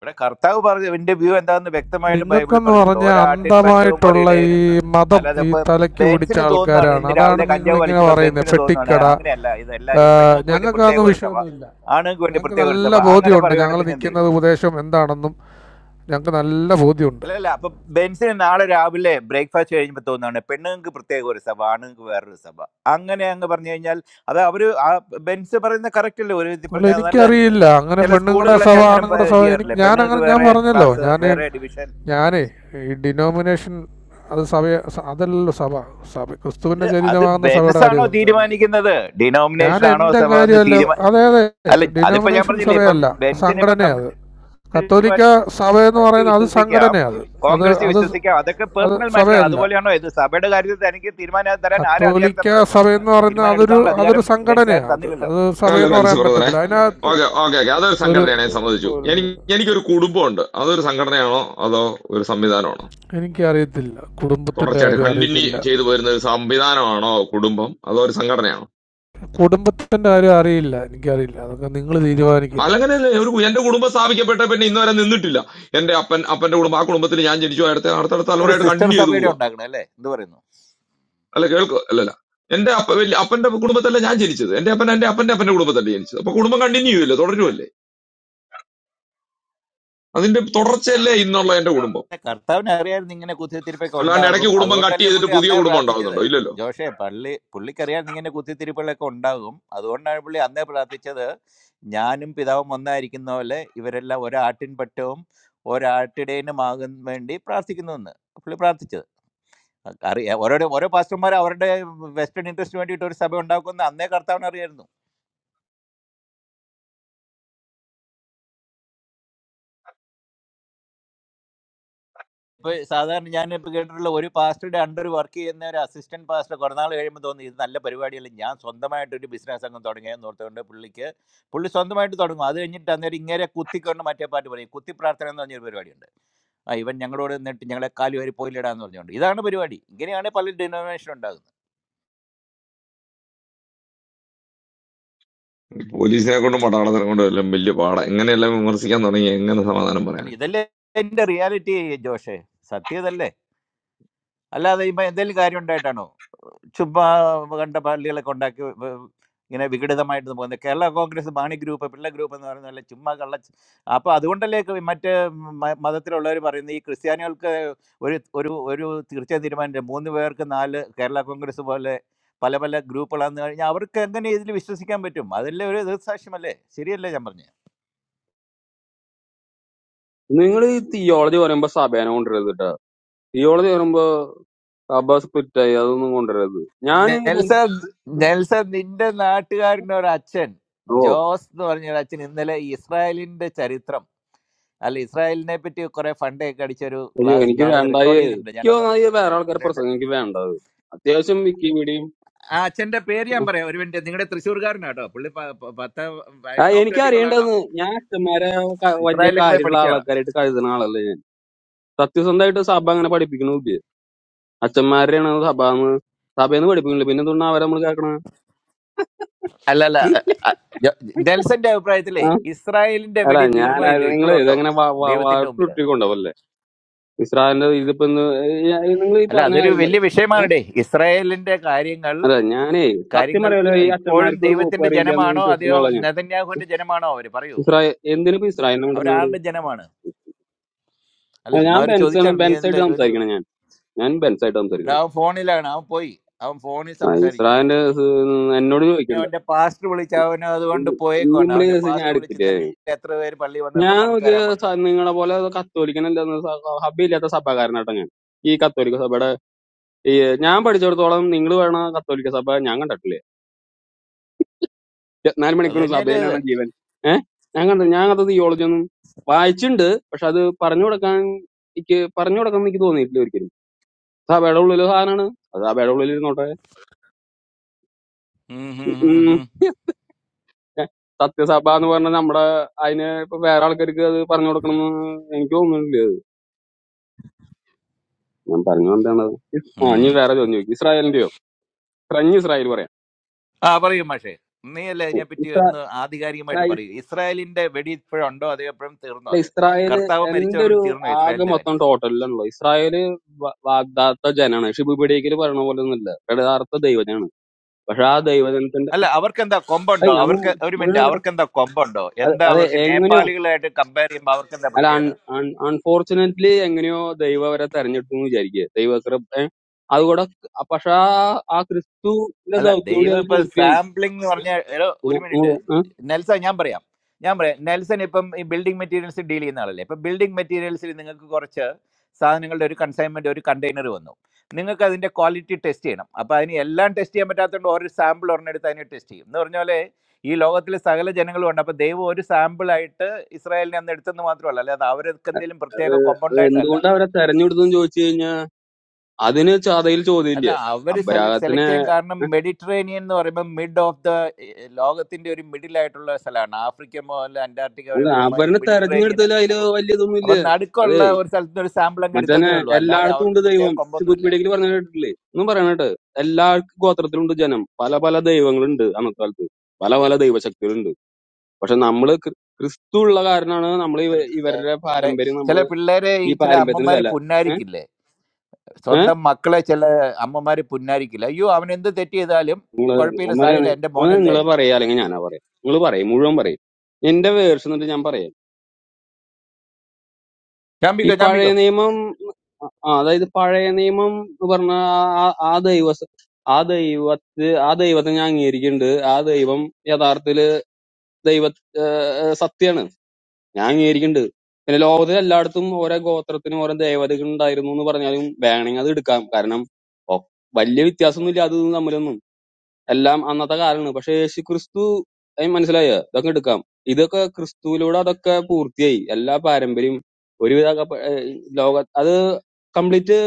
Speaker 21: ഇവിടെ കർത്താവ് പറഞ്ഞു എന്റെ വ്യൂ എന്താണെന്ന് വ്യക്തമായിട്ട് ബൈബിളിൽ
Speaker 20: നിങ്ങൾക്കെന്ന്
Speaker 21: പറഞ്ഞിട്ടുണ്ട്
Speaker 20: പറഞ്ഞ
Speaker 21: ഒരാട്ടിൻ പറ്റവും
Speaker 20: അന്ധമായിട്ടുള്ള
Speaker 21: ഒരിടയനും
Speaker 20: ഈ
Speaker 21: എന്നാണ്
Speaker 20: മതം
Speaker 21: അല്ലാതെ
Speaker 20: ഈ
Speaker 21: ഇപ്പൊ
Speaker 20: തലയ്ക്ക് പിടിച്ച
Speaker 21: ബെൻസിന് തോന്നുന്നതാണ്
Speaker 20: ആൾക്കാരാണ്
Speaker 21: ഇന്ന്
Speaker 20: അതാണ്
Speaker 21: രാവിലെ
Speaker 20: നിങ്ങൾ
Speaker 21: കഞ്ചാവ്
Speaker 20: ഇങ്ങനെ
Speaker 21: വലിച്ചപ്പോ
Speaker 20: പറയുന്നത്
Speaker 21: ബെൻസിന് തോന്നുന്നതാണ്
Speaker 20: ഫെട്ടിക്കട
Speaker 21: അങ്ങനെയല്ല ഇത് എല്ലാവരും പെണ്ണുങ്ങൾക്ക് വേണ്ടി
Speaker 20: ഞങ്ങൾക്ക്
Speaker 21: പ്രത്യേക
Speaker 20: അതൊന്നും
Speaker 21: ഒരു സഭ
Speaker 20: വിഷയമൊന്നുമില്ല
Speaker 21: ആണുങ്ങൾക്ക് വേണ്ടി
Speaker 20: ഞങ്ങൾക്ക്
Speaker 21: പ്രത്യേക ഒരു
Speaker 20: നല്ല
Speaker 21: സഭ അങ്ങനെ
Speaker 20: ബോധ്യമുണ്ട് ഞങ്ങൾ
Speaker 21: പറയുവാണെങ്കിൽ പിന്നെ എന്ത് ചെയ്യും
Speaker 20: നിൽക്കുന്നത് ഉപദേശം എന്താണെന്നും ഞങ്ങൾക്ക് നല്ല ബോധ്യമുണ്ട്
Speaker 21: അല്ലല്ല അപ്പൊ ബെൻസിന് നാളെ രാവിലെ ബ്രേക്ക്ഫാസ്റ്റ് കഴിയുമ്പോൾ തോന്നുന്നതാണ് പെണ്ണുങ്ങൾക്ക് പ്രത്യേക ഒരു സഭ ആണുങ്ങൾക്ക് വേറൊരു സഭ അങ്ങനെ അങ്ങ് പറഞ്ഞു കഴിഞ്ഞാൽ അത് അവര് ആ ബെൻസ് പറയുന്ന കറക്റ്റ് അല്ലേ ഒരു വിധത്തിൽ
Speaker 20: അല്ല
Speaker 21: പറഞ്ഞാൽ അത് നല്ലതല്ലേ
Speaker 20: എനിക്കറിയില്ല അങ്ങനെ
Speaker 21: ചില
Speaker 20: പെണ്ണുങ്ങളുടെ
Speaker 21: സ്കൂളുകളൊക്കെ
Speaker 20: സഭ
Speaker 21: അങ്ങനെ പ-
Speaker 20: ആണുങ്ങളുടെ സഭ എനിക്ക്
Speaker 21: ചെയ്യാറില്ലേ
Speaker 20: ഞാൻ അങ്ങനെ
Speaker 21: പെണ്ണുങ്ങൾക്ക്
Speaker 20: ഞാൻ
Speaker 21: വേറെ
Speaker 20: പറഞ്ഞല്ലോ
Speaker 21: ക്ലാസ്
Speaker 20: ഞാൻ
Speaker 21: വേറെ ഡിവിഷൻ
Speaker 20: ഞാനേ ഈ ഡിനോമിനേഷൻ അത് സഭ അതല്ലല്ലോ സഭ സഭ
Speaker 21: അത്
Speaker 20: ക്രിസ്തുവിൻ്റെ
Speaker 21: അത്
Speaker 20: ശരീരമാകുന്ന സഭയുടെ
Speaker 21: ബെൻസ് ആണോ
Speaker 20: കാര്യം സംസാരിക്കുന്നത്
Speaker 21: തീരുമാനിക്കുന്നത്
Speaker 20: ഞാൻ
Speaker 21: ഡിനോമിനേഷൻ ആണോ
Speaker 20: എന്റെ
Speaker 21: സഭ എന്ന്
Speaker 20: കാര്യമല്ല
Speaker 21: തീരുമാന
Speaker 20: അതെ അതെ
Speaker 21: അല്ല അതിപ്പോ ഞാൻ
Speaker 20: ഡിനോമിനേഷൻ
Speaker 21: പറഞ്ഞില്ലേ ഇപ്പം
Speaker 20: സഭയല്ല
Speaker 21: ബെൻസിന് ഇപ്പൊ
Speaker 20: സംഘടനയാണ് അത്
Speaker 21: കമ്മ്യൂണിസ്റ്റ്
Speaker 20: കത്തോലിക്ക സഭ എന്ന്
Speaker 21: പാർട്ടി
Speaker 20: പറയുന്നത് അത്
Speaker 21: വിശ്വസിക്കാം
Speaker 20: സംഘടനയാണ് അത്
Speaker 21: കോൺഗ്രസ്
Speaker 20: അത് അത്
Speaker 21: വിശ്വസിക്കാം അതൊക്കെ
Speaker 20: അത്
Speaker 21: പേഴ്സണൽ മാറ്ററാണ്
Speaker 20: സഭയല്ല
Speaker 21: അതുപോലെയാണോ ഇത് സഭയുടെ കാര്യത്തിൽ തനിക്ക് തീരുമാനം തരാൻ ആരാ അധികാരം
Speaker 20: കത്തോലിക്ക
Speaker 21: തന്നത്
Speaker 20: സഭ എന്ന് പറയുന്നത്
Speaker 21: തീരുമാനം
Speaker 20: അതൊരു
Speaker 21: എടുക്കാനുള്ള
Speaker 20: അതൊരു
Speaker 21: അധികാരം ബെൻസ് ആരും
Speaker 20: സംഘടനയാണ് അത്
Speaker 21: തന്നില്ലല്ലോ
Speaker 20: അത്
Speaker 4: നല്ല
Speaker 20: സഭയെന്ന്
Speaker 4: മനസ്സ്
Speaker 20: പറയാൻ
Speaker 4: ബ്രദറെ
Speaker 20: പറ്റത്തില്ല അതിനകത്ത്
Speaker 4: ഓക്കെ ഓക്കെ ഓക്കെ അതൊരു
Speaker 20: ഒരു
Speaker 4: സംഘടനയാണ് ഞാൻ സമ്മതിച്ചു
Speaker 20: ഒരു
Speaker 4: എനിക്ക് എനിക്കൊരു കുടുംബമുണ്ട് അതൊരു സംഘടനയാണോ അതോ ഒരു സംവിധാനമാണോ
Speaker 20: എനിക്കറിയത്തില്ല കുടുംബത്തിൻ്റെ
Speaker 4: തുടർച്ചയായിട്ട്
Speaker 20: കാര്യം
Speaker 4: കണ്ടിന്യൂ
Speaker 20: അറിയത്തില്ല
Speaker 4: ചെയ്തു വരുന്ന ഒരു സംവിധാനമാണോ കുടുംബം അതോ ഒരു സംഘടനയാണോ
Speaker 20: കുടുംബത്തിൻ്റെ കാര്യം അറിയില്ല എനിക്കറിയില്ല അതൊക്കെ നിങ്ങൾ തീരുമാനിക്കുക
Speaker 4: അലങ്ങനെയല്ലേ ഒരു കു- എന്റെ കുടുംബം സ്ഥാപിക്കപ്പെട്ട പിന്നെ ഇന്നുവരെ നിന്നിട്ടില്ല എന്റെ അപ്പൻ അപ്പന്റെ കുടുംബം ആ കുടുംബത്തിൽ ഞാൻ ജനിച്ചു അടുത്ത അടുത്തടുത്ത
Speaker 21: ഒരു
Speaker 4: തലമുറയായിട്ട്
Speaker 21: സിസ്റ്റർ
Speaker 4: കണ്ടിന്യൂ ചെയ്തു
Speaker 21: സഭയുടെ
Speaker 4: പോവുക
Speaker 21: ഉണ്ടാക്കണം അല്ലേ എന്ത് പറയുന്നു
Speaker 4: അല്ല കേൾക്കുക അല്ലല്ല എന്റെ അപ്പ വലിയ അപ്പന്റെ കുടുംബത്തല്ല ഞാൻ ജനിച്ചത് എന്റെ അപ്പൻ എന്റെ അപ്പന്റെ അപ്പന്റെ കുടുംബത്തല്ല ജനിച്ചത് അപ്പൊ കുടുംബം കണ്ടിന്യൂ ചെയ്യില്ലേ തുടരുമല്ലേ അതിന്റെ തുടർച്ചയല്ലേ ഇന്നുള്ള എന്റെ കുടുംബം
Speaker 21: കർത്താവിനെ അറിയായിരുന്നു ഇങ്ങനെ കുത്തിത്തിരിപ്പൊക്കെ
Speaker 4: അല്ലാണ്ട്
Speaker 21: ഉണ്ടാകും
Speaker 4: ഇടയ്ക്ക് കുടുംബം കട്ട്
Speaker 21: അതുകൊണ്ടല്ലേ
Speaker 4: ചെയ്തിട്ട്
Speaker 21: പുള്ളി
Speaker 4: പുതിയ
Speaker 21: അന്നേ
Speaker 4: കുടുംബം
Speaker 21: പ്രാർത്ഥിച്ചത്
Speaker 4: ഉണ്ടാകുന്നുണ്ടോ ഇല്ലല്ലോ
Speaker 21: ജോഷേ പള്ളി പുള്ളിക്കറിയായിരുന്നു ഇങ്ങനെ കുത്തിത്തിരിപ്പുകളൊക്കെ ഉണ്ടാകും അതുകൊണ്ടാണ് പുള്ളി അന്നേ പ്രാർത്ഥിച്ചത് ഞാനും പിതാവും ഒന്നായിരിക്കുന്ന പോലെ ഇവരെല്ലാം ഒരാട്ടിൻ പറ്റവും ഒരാട്ടിടേനുമാകാൻ വേണ്ടി പ്രാർത്ഥിക്കുന്നു എന്ന് പുള്ളി പ്രാർത്ഥിച്ചത് അറിയാം ഓരോ ഓരോ പാസ്റ്റർമാർ അവരുടെ വെസ്റ്റേൺ ഇൻട്രസ്റ്റിന് വേണ്ടിയിട്ട് ഒരു സഭ ഉണ്ടാക്കുമെന്ന് അന്നേ കർത്താവിന് അറിയായിരുന്നു ഇപ്പൊ സാധാരണ ഞാൻ ഇപ്പൊ കേട്ടിട്ടുള്ള ഒരു പാസ്റ്ററുടെ അണ്ടർ വർക്ക് ചെയ്യുന്ന ഒരു അസിസ്റ്റന്റ് പാസ്റ്റർ കുറെ നാൾ കഴിയുമ്പോൾ തോന്നി ഇത് നല്ല പരിപാടിയല്ല ഞാൻ സ്വന്തമായിട്ട് ഒരു ബിസിനസ് അങ്ങ് തുടങ്ങിയെന്ന് ഓർത്തുകൊണ്ട് പുള്ളിക്ക് പുള്ളി സ്വന്തമായിട്ട് തുടങ്ങും അത് കഴിഞ്ഞിട്ട് അന്നേരം ഇങ്ങനെ കുത്തിക്കൊണ്ട് മറ്റേ പാട്ട് പറയും കുത്തി പ്രാർത്ഥന എന്ന് പറഞ്ഞൊരു പരിപാടിയുണ്ട് ആ ഇവൻ ഞങ്ങളോട് നിന്നിട്ട് ഞങ്ങളെ കാലി വരെ പോയില്ലടാന്ന് പറഞ്ഞുകൊണ്ട് ഇതാണ് പരിപാടി ഇങ്ങനെയാണ് പല ഡിനോമിനേഷൻ ഉണ്ടാകുന്നത്
Speaker 4: ഈ പോലീസിനെ കൊണ്ടും പട്ടാളത്തിനെ കൊണ്ടും എല്ലാം വലിയ പാടാ എങ്ങനെയെല്ലാം വിമർശിക്കാൻ തുടങ്ങി എങ്ങനെ സമാധാനം പറയാൻ
Speaker 21: അല്ല ഇതല്ലേ എന്റെ റിയാലിറ്റി ജോഷേ സത്യതല്ലേ അല്ലാതെ ഇപ്പൊ എന്തെങ്കിലും കാര്യം ഉണ്ടായിട്ടാണോ ചുമ്മാ കണ്ട പള്ളികളൊക്കെ ഉണ്ടാക്കി വ- ഇങ്ങനെ വിഘടിതമായിട്ട് പോകുന്നത് കേരള കോൺഗ്രസ് ബാണി ഗ്രൂപ്പ് പിള്ള ഗ്രൂപ്പ് എന്ന് പറയുന്നതല്ല ചുമ്മാ കള്ള അപ്പോൾ അതുകൊണ്ടല്ലേ ക- മറ്റ് മ- മതത്തിലുള്ളവർ പറയുന്നത് ഈ ക്രിസ്ത്യാനികൾക്ക് ഒരു ഒരു ഒരു തീർച്ചയായും തീരുമാനം മൂന്ന് പേർക്ക് നാല് കേരള കോൺഗ്രസ് പോലെ പല പല ഗ്രൂപ്പുകളാന്ന് കഴിഞ്ഞാൽ അവർക്ക് എങ്ങനെ ഇതിൽ വിശ്വസിക്കാൻ പറ്റും അതല്ലേ ഒരു ദൃസാക്ഷ്യമല്ലേ ശരിയല്ലേ ഞാൻ പറഞ്ഞത്
Speaker 12: നിങ്ങൾ ഈ തിയോളജി പറയുമ്പോ സഭേനെ കൊണ്ടുവരരുത് കേട്ടോ തിയോളജി പറയുമ്പോ അബ്ബാസ് പിറ്റായി അതൊന്നും കൊണ്ടുവരരുത് ഞാൻ ഈ ബെൻസ്
Speaker 21: നെൽസൺ നെൽസൺ നിന്റെ നാട്ടുകാരൻ്റെ ഒരു അച്ഛൻ ജോസ് എന്ന് പറഞ്ഞ ഒരു അച്ഛൻ ഇന്നലെ ഇസ്രായേലിന്റെ ചരിത്രം അല്ല ഇസ്രായേലിനെ പറ്റി കുറെ ഫണ്ടൊക്കെ അടിച്ചൊരു
Speaker 12: അയ്യോ
Speaker 21: ക്ലാസ്
Speaker 12: എനിക്ക്
Speaker 21: ഞാനത്
Speaker 12: വേണ്ടായേ
Speaker 21: റെക്കോർഡ് ചെയ്തിട്ടുണ്ട്
Speaker 12: എനിക്ക്
Speaker 21: ഞാനത് ഒന്ന്
Speaker 12: തോന്നാതെ
Speaker 21: ഒന്ന്
Speaker 12: വേറെ ആൾക്കാരെ
Speaker 21: ഇതിലുണ്ട്
Speaker 12: പ്രസംഗം എനിക്ക് വേണ്ടത് അത്യാവശ്യം വിക്കിപീഡിയയും
Speaker 21: ആ അച്ഛന്റെ പേര് ഞാൻ പറയാം ഒരു മിനിറ്റ് നിങ്ങളുടെ തൃശ്ശൂർകാരനാട്ടോ പുള്ളി പ- പ- പത്ത്
Speaker 12: ആ എനിക്ക്
Speaker 21: ഡോക്ടറേറ്റ് ഉള്ള ആളാ
Speaker 12: അറിയേണ്ടതെന്ന് ഞാൻ അച്ഛന്മാരെ ക- വലിയ
Speaker 21: ഇസ്രായേലിലൊക്കെ പോയി
Speaker 12: കാര്യമുള്ള
Speaker 21: പഠിച്ച ആളാ
Speaker 12: ആൾക്കാരായിട്ട് കരുതുന്ന ആളല്ലേ ഞാൻ. സത്യസന്ധമായിട്ട് സഭ അങ്ങനെ പഠിപ്പിക്കണില്ല അച്ഛന്മാരെയാണ് സഭ എന്ന് സഭയെന്ന് പഠിപ്പിക്കണില്ല പിന്നെ എന്തുകൊണ്ടാ അവരെ നമ്മൾ കേൾക്കണ
Speaker 21: അല്ല അല്ല അ- ജോ- നെൽസന്റെ അഭിപ്രായത്തിലേ
Speaker 12: ആ
Speaker 21: ഇസ്രായേലിന്റെ
Speaker 12: അല്ല
Speaker 21: വെടി തീർന്നോ ഇല്ലയോ
Speaker 12: ഞാനായിരുന്നു നിങ്ങൾ
Speaker 21: ഇപ്പോഴും ഉണ്ടോ
Speaker 12: ഇതെങ്ങനെ
Speaker 21: ദൈവത്തിന്റെ മുമ്പില്
Speaker 12: വാട്ടുകൊണ്ടാവല്ലേ ഇസ്രായേലിന്റെ ഇതിപ്പോ നിങ്ങൾ ഈ
Speaker 21: അല്ല
Speaker 12: പറഞ്ഞ
Speaker 21: അതൊരു
Speaker 12: കാര്യം
Speaker 21: വലിയ
Speaker 12: പറയും
Speaker 21: വിഷയമാണ് ഡേ ഇസ്രായേലിന്റെ കാര്യങ്ങൾ
Speaker 12: അതെ ഞാനേ സത്യം
Speaker 21: കാര്യങ്ങൾ
Speaker 12: പറയല്ലോ ഈ
Speaker 21: ഇപ്പോഴും
Speaker 12: അച്ഛന്മാർക്ക് ഒരു കോപ്പ്
Speaker 21: ദൈവത്തിന്റെ
Speaker 12: അറിയില്ല എന്ന്
Speaker 21: ജനമാണോ അതെയോ
Speaker 12: വിശ്വസിക്കുന്ന ആളാ ഞാൻ
Speaker 21: നെതന്യാഹുവിന്റെ ജനമാണോ അവര് പറയൂ
Speaker 12: ഇസ്രായേൽ എന്തിനിപ്പോ ഇസ്രായേലിനെ കൊണ്ടുവന്നത്
Speaker 21: അവരാരുടെ ജനമാണ് അല്ല
Speaker 12: ആ,
Speaker 21: ചുമ്മാ
Speaker 12: ഞാൻ
Speaker 21: അവര്
Speaker 12: ബെൻസാണ്
Speaker 21: ചോദിച്ചാണ് നീ അല്ല
Speaker 12: ബെൻസായിട്ട്
Speaker 21: ഒരു
Speaker 12: സംസാരിക്കണം ഞാൻ ഞാൻ ബെൻസായിട്ട്
Speaker 21: എടാ,
Speaker 12: സംസാരിക്കണം
Speaker 21: അവൻ ഫോണിലാണ് അവൻ പോയി അവൻ ഫോണിൽ
Speaker 12: ആ
Speaker 21: സംസാരിക്കുക
Speaker 12: ഇസ്രായേലിന്റെ സ് എന്നോട്
Speaker 21: പിന്നെ
Speaker 12: ചോദിക്കണ്ട
Speaker 21: അവന്റെ പാസ്റ്റർ വിളിച്ച് അവന് അതുകൊണ്ട് പോയേക്കുവാണ്
Speaker 12: ഇമ്മിളി
Speaker 21: അവന്റെ
Speaker 12: കേസ് ഞാൻ
Speaker 21: പാസ്റ്റർ വിളിച്ച്
Speaker 12: എടുത്തില്ലേ
Speaker 21: ഇന്നലെ എത്ര പേര് പള്ളി വന്ന് എന്ന്
Speaker 12: ഞാൻ
Speaker 21: കണക്ക്
Speaker 12: നോക്കിയ
Speaker 21: തരാൻ പറഞ്ഞു
Speaker 12: സ- നിങ്ങളെ പോലെ കത്തോലിക്കനല്ല ഹബ്ബില്ലാത്ത സഭക്കാരനാട്ടോ ഞാൻ ഈ കത്തോലിക്ക സഭയുടെ ഈ ഞാൻ പഠിച്ചിടത്തോളം നിങ്ങൾ വേണ കത്തോലിക്ക സഭ ഞാൻ കണ്ടിട്ടില്ലേ ഇരുപത്തിനാല്
Speaker 21: അത്
Speaker 12: മണിക്കൂർ
Speaker 21: തന്നെയല്ലേ ഇത്
Speaker 12: സഭയിലാണ് ജീവൻ ഏഹ് ഞാൻ കണ്ട ഞാൻ അത് തിയോളജി ഒന്നും വായിച്ചിട്ടുണ്ട് പക്ഷെ അത് പറഞ്ഞു കൊടുക്കാൻ എനിക്ക് പറഞ്ഞു കൊടുക്കാൻ എനിക്ക് തോന്നിയിട്ടില്ല ഒരിക്കലും സഭയുടെ ഉള്ളിൽ സാധനമാണ് അത് സഭയുടെ ഉള്ളിൽ
Speaker 21: ഉം ഹും ഹും
Speaker 12: ഇരുന്നോട്ടെ
Speaker 21: ഹും.
Speaker 12: സത്യസഭ എന്ന് പറഞ്ഞ നമ്മുടെ അതിന് ഇപ്പൊ വേറെ ആൾക്കാർക്ക് അത് പറഞ്ഞു കൊടുക്കണമെന്ന് എനിക്ക് തോന്നുന്നില്ല ഞാൻ പറഞ്ഞു എന്താണ് ഇസ്- ആ ഇനി
Speaker 21: ഉം.
Speaker 12: വേറെ ചോദ്യം ചോദിക്കും ഇസ്രായേലിന്റെയോ ഫ്രഞ്ച് ഇസ്രായേൽ പറയാം
Speaker 21: ആ പറയൂ മാഷേ നീ അല്ലേ അതിനെപ്പറ്റി
Speaker 12: ഇസ്രാ-
Speaker 21: ഒന്ന്
Speaker 12: അല്ല
Speaker 21: ആധികാരികമായിട്ട് പറയൂ ഇസ്രായേലിന്റെ വെടി ഇപ്പോഴുണ്ടോ അതോ എപ്പോഴും തീർന്നോ അത്
Speaker 12: ഇസ്രായേല്
Speaker 21: കർത്താവ്
Speaker 12: എന്റെ ഒരു
Speaker 21: മരിച്ചവരോട് തീർന്നോ
Speaker 12: ആകെ
Speaker 21: ഇസ്രായേലിന്റെ കാര്യം
Speaker 12: മൊത്തം ടോട്ടലിലാണല്ലോ ഇസ്രായേല് വ- വാഗ്ദാത്ത ജനാണ് ഷിബുബിഡിയക്കിൽ പറയണ പോലെ ഒന്നുമില്ല യഥാർത്ഥ ദൈവജനാണ് പക്ഷെ ആ ദൈവജനത്തിന്റെ
Speaker 21: അല്ല അവർക്ക് എന്താ
Speaker 12: അത്
Speaker 21: കൊമ്പുണ്ടോ
Speaker 12: ഞാൻ
Speaker 21: അവർക്ക് ഒരു
Speaker 12: മുഴുവൻ
Speaker 21: മിനിറ്റ്
Speaker 12: നോക്കട്ടെ
Speaker 21: അവർക്ക് എന്താ കൊമ്പുണ്ടോ
Speaker 12: അത്
Speaker 21: എന്താ
Speaker 12: അത്
Speaker 21: അവർക്ക്
Speaker 12: എങ്ങനെയോ
Speaker 21: നേപ്പാളികളായിട്ട് കമ്പയർ ചെയ്യുമ്പോൾ അവർക്ക് എന്താ
Speaker 12: അല്ല
Speaker 21: പ്രത്യേകത
Speaker 12: അൺഫോർച്ചുനേറ്റ്ലി എങ്ങനെയോ ദൈവം അവരെ തെരഞ്ഞെടുത്തു എന്ന് വിചാരിക്കുക ദൈവകൃപ ഏ? അതുകൂടെ ക- പക്ഷെ ആ ആ ക്രിസ്തുവിന്റെ
Speaker 21: അല്ല
Speaker 12: ദൗത്യോടി
Speaker 21: ദൈവം
Speaker 12: അത്
Speaker 21: ഇപ്പൊ
Speaker 12: പൂർത്തിയായി
Speaker 21: സാമ്പിളിംഗ് എന്ന്
Speaker 12: ഏ?
Speaker 21: പറഞ്ഞ എടോ, ഒരു
Speaker 12: ഉം,
Speaker 21: മിനിറ്റ്
Speaker 12: ഉം, ഉം.
Speaker 21: നെൽസൺ ഞാൻ പറയാം ഞാൻ പറയാം നെൽസൺ ഇപ്പം ഈ ബിൽഡിംഗ് മെറ്റീരിയൽസ് ഡീൽ ചെയ്യുന്ന ആളല്ലേ ഇപ്പൊ ബിൽഡിംഗ് മെറ്റീരിയൽസിൽ നിങ്ങൾക്ക് കുറച്ച് സാധനങ്ങളുടെ ഒരു കൺസൈൻമെന്റ് ഒരു കണ്ടെയ്നർ വന്നു നിങ്ങൾക്ക് അതിന്റെ ക്വാളിറ്റി ടെസ്റ്റ് ചെയ്യണം അപ്പൊ അതിന് എല്ലാം ടെസ്റ്റ് ചെയ്യാൻ പറ്റാത്തതുകൊണ്ട് ഒരു സാമ്പിൾ ഒരെണ്ണെടുത്ത് അതിനെ ടെസ്റ്റ് ചെയ്യും എന്ന് പറഞ്ഞ പോലെ ഈ ലോകത്തിലെ സകല ജനങ്ങളും ഉണ്ട് അപ്പൊ ദൈവം ഒരു സാമ്പിളായിട്ട് ഇസ്രായേലിനെ അന്ന് എടുത്തെന്ന് മാത്രമല്ല അല്ലാതെ അവർക്ക് എന്തെങ്കിലും
Speaker 12: അത്
Speaker 21: പ്രത്യേക
Speaker 12: അത്
Speaker 21: compound ആയിട്ടല്ല
Speaker 12: എന്തുകൊണ്ട് അവരെ തെരഞ്ഞെടുത്തു എന്ന് ചോദിച്ചു കഴിഞ്ഞാൽ അതിന് ചതയിൽ
Speaker 21: അല്ല
Speaker 12: ചോദ്യമില്ല
Speaker 21: അവര് സെലക്ട് സെലക്ട്
Speaker 12: അബ്രാഹത്തിനെ
Speaker 21: ചെയ്യാൻ കാരണം മെഡിറ്ററേനിയൻ എന്ന് പറയുമ്പോൾ മിഡ് ഓഫ് ദ ലോകത്തിന്റെ ഒരു മിഡിൽ ആയിട്ടുള്ള സ്ഥലമാണ് ആഫ്രിക്ക മുതൽ അന്റാർട്ടിക്ക വരെ
Speaker 12: അല്ല
Speaker 21: പോകുമ്പോൾ അതിന്
Speaker 12: അബരനെ
Speaker 21: മെഡിറ്ററേനിയൻ
Speaker 12: തെരഞ്ഞെടുത്തതിൽ
Speaker 21: ആണ്
Speaker 12: അതില്
Speaker 21: അപ്പം
Speaker 12: വലിയ ഇതൊന്നും ഇല്ല
Speaker 21: അപ്പം
Speaker 12: അതെ
Speaker 21: നടുക്കുള്ള ഒരു സ്ഥലത്ത് നിന്ന് ഒരു സാമ്പിൾ അങ്ങ്
Speaker 12: മറ്റേ
Speaker 21: എടുത്തന്നേ ഉള്ളൂ അല്ലാതെ
Speaker 12: എല്ലായിടത്തും ഉണ്ട്
Speaker 21: അവർക്ക് പ്രത്യേക
Speaker 12: ദൈവം
Speaker 21: കൊമ്പൊന്നുമില്ല
Speaker 12: ശുഭപീഠയ്ക്ക് പറഞ്ഞ കേട്ടിട്ടില്ലേ ഒന്നും പറയണ കേട്ടോ എല്ലാ ഗോത്രത്തിലുണ്ട് ജനം പല പല ദൈവങ്ങളുണ്ട് അന്നത്തെ കാലത്ത് പല പല ദൈവശക്തികളുണ്ട് പക്ഷെ നമ്മള് ക്രി- ക്രിസ്തു ഉള്ള കാരണമാണ് നമ്മൾ
Speaker 21: സെലക്ട്
Speaker 12: ഇവരുടെ
Speaker 21: എന്റെ
Speaker 12: പാരമ്പര്യം നമ്മൾ
Speaker 21: ചില പിള്ളേരെ ഈ
Speaker 12: ഈ
Speaker 21: ചില
Speaker 12: പാരമ്പര്യത്തിന്
Speaker 21: അമ്മമാര്
Speaker 12: വില ഏഹ്
Speaker 21: പുന്നാരിക്കില്ലേ
Speaker 12: ഏഹ്
Speaker 21: സ്വന്തം മക്കളെ ചില അമ്മമാര് പുന്നാരിക്കില്ല അയ്യോ അവൻ എന്ത് തെറ്റ് ചെയ്താലും
Speaker 12: നിങ്ങള്
Speaker 21: കുഴപ്പമില്ല
Speaker 12: ഒന്നര
Speaker 21: സാരമില്ല എന്റെ മോനല്ലേ
Speaker 12: നിങ്ങൾ പറയാ അല്ലെങ്കിൽ ഞാനാ പറയാം നിങ്ങൾ പറയും മുഴുവൻ പറയും എന്റെ വേർഷൻ എന്നിട്ട് ഞാൻ പറയാം ഈ
Speaker 21: ചാമ്പിക്കോ
Speaker 12: പഴയ
Speaker 21: ചാമ്പിക്കോ
Speaker 12: നിയമം ആ, അതായത് പഴയ നിയമം എന്ന് പറഞ്ഞ ആ ആ ദൈവ ആ ദൈവത്തെ ആ ദൈവത്തെ ഞാൻ അംഗീകരിക്കുന്നുണ്ട് ആ ദൈവം യഥാർത്ഥത്തില് ദൈവ സത്യമാണ് ഞാൻ അംഗീകരിക്കുന്നുണ്ട് പിന്നെ ലോകത്തിൽ എല്ലായിടത്തും ഓരോ ഗോത്രത്തിനും ഓരോ ദേവതകൾ ഉണ്ടായിരുന്നു എന്ന് പറഞ്ഞാലും വേണമെങ്കിൽ അത് എടുക്കാം കാരണം ഓ, വലിയ വ്യത്യാസമൊന്നുമില്ല അത് ഇതും തമ്മിലൊന്നും എല്ലാം അന്നത്തെ കാലമാണ് പക്ഷെ യേശു ക്രിസ്തു ഏ, മനസ്സിലായോ ഇതൊക്കെ എടുക്കാം ഇതൊക്കെ ക്രിസ്തുവിലൂടെ അതൊക്കെ പൂർത്തിയായി എല്ലാ പാരമ്പര്യം ഒരുവിധ ലോക അത് കംപ്ലീറ്റ്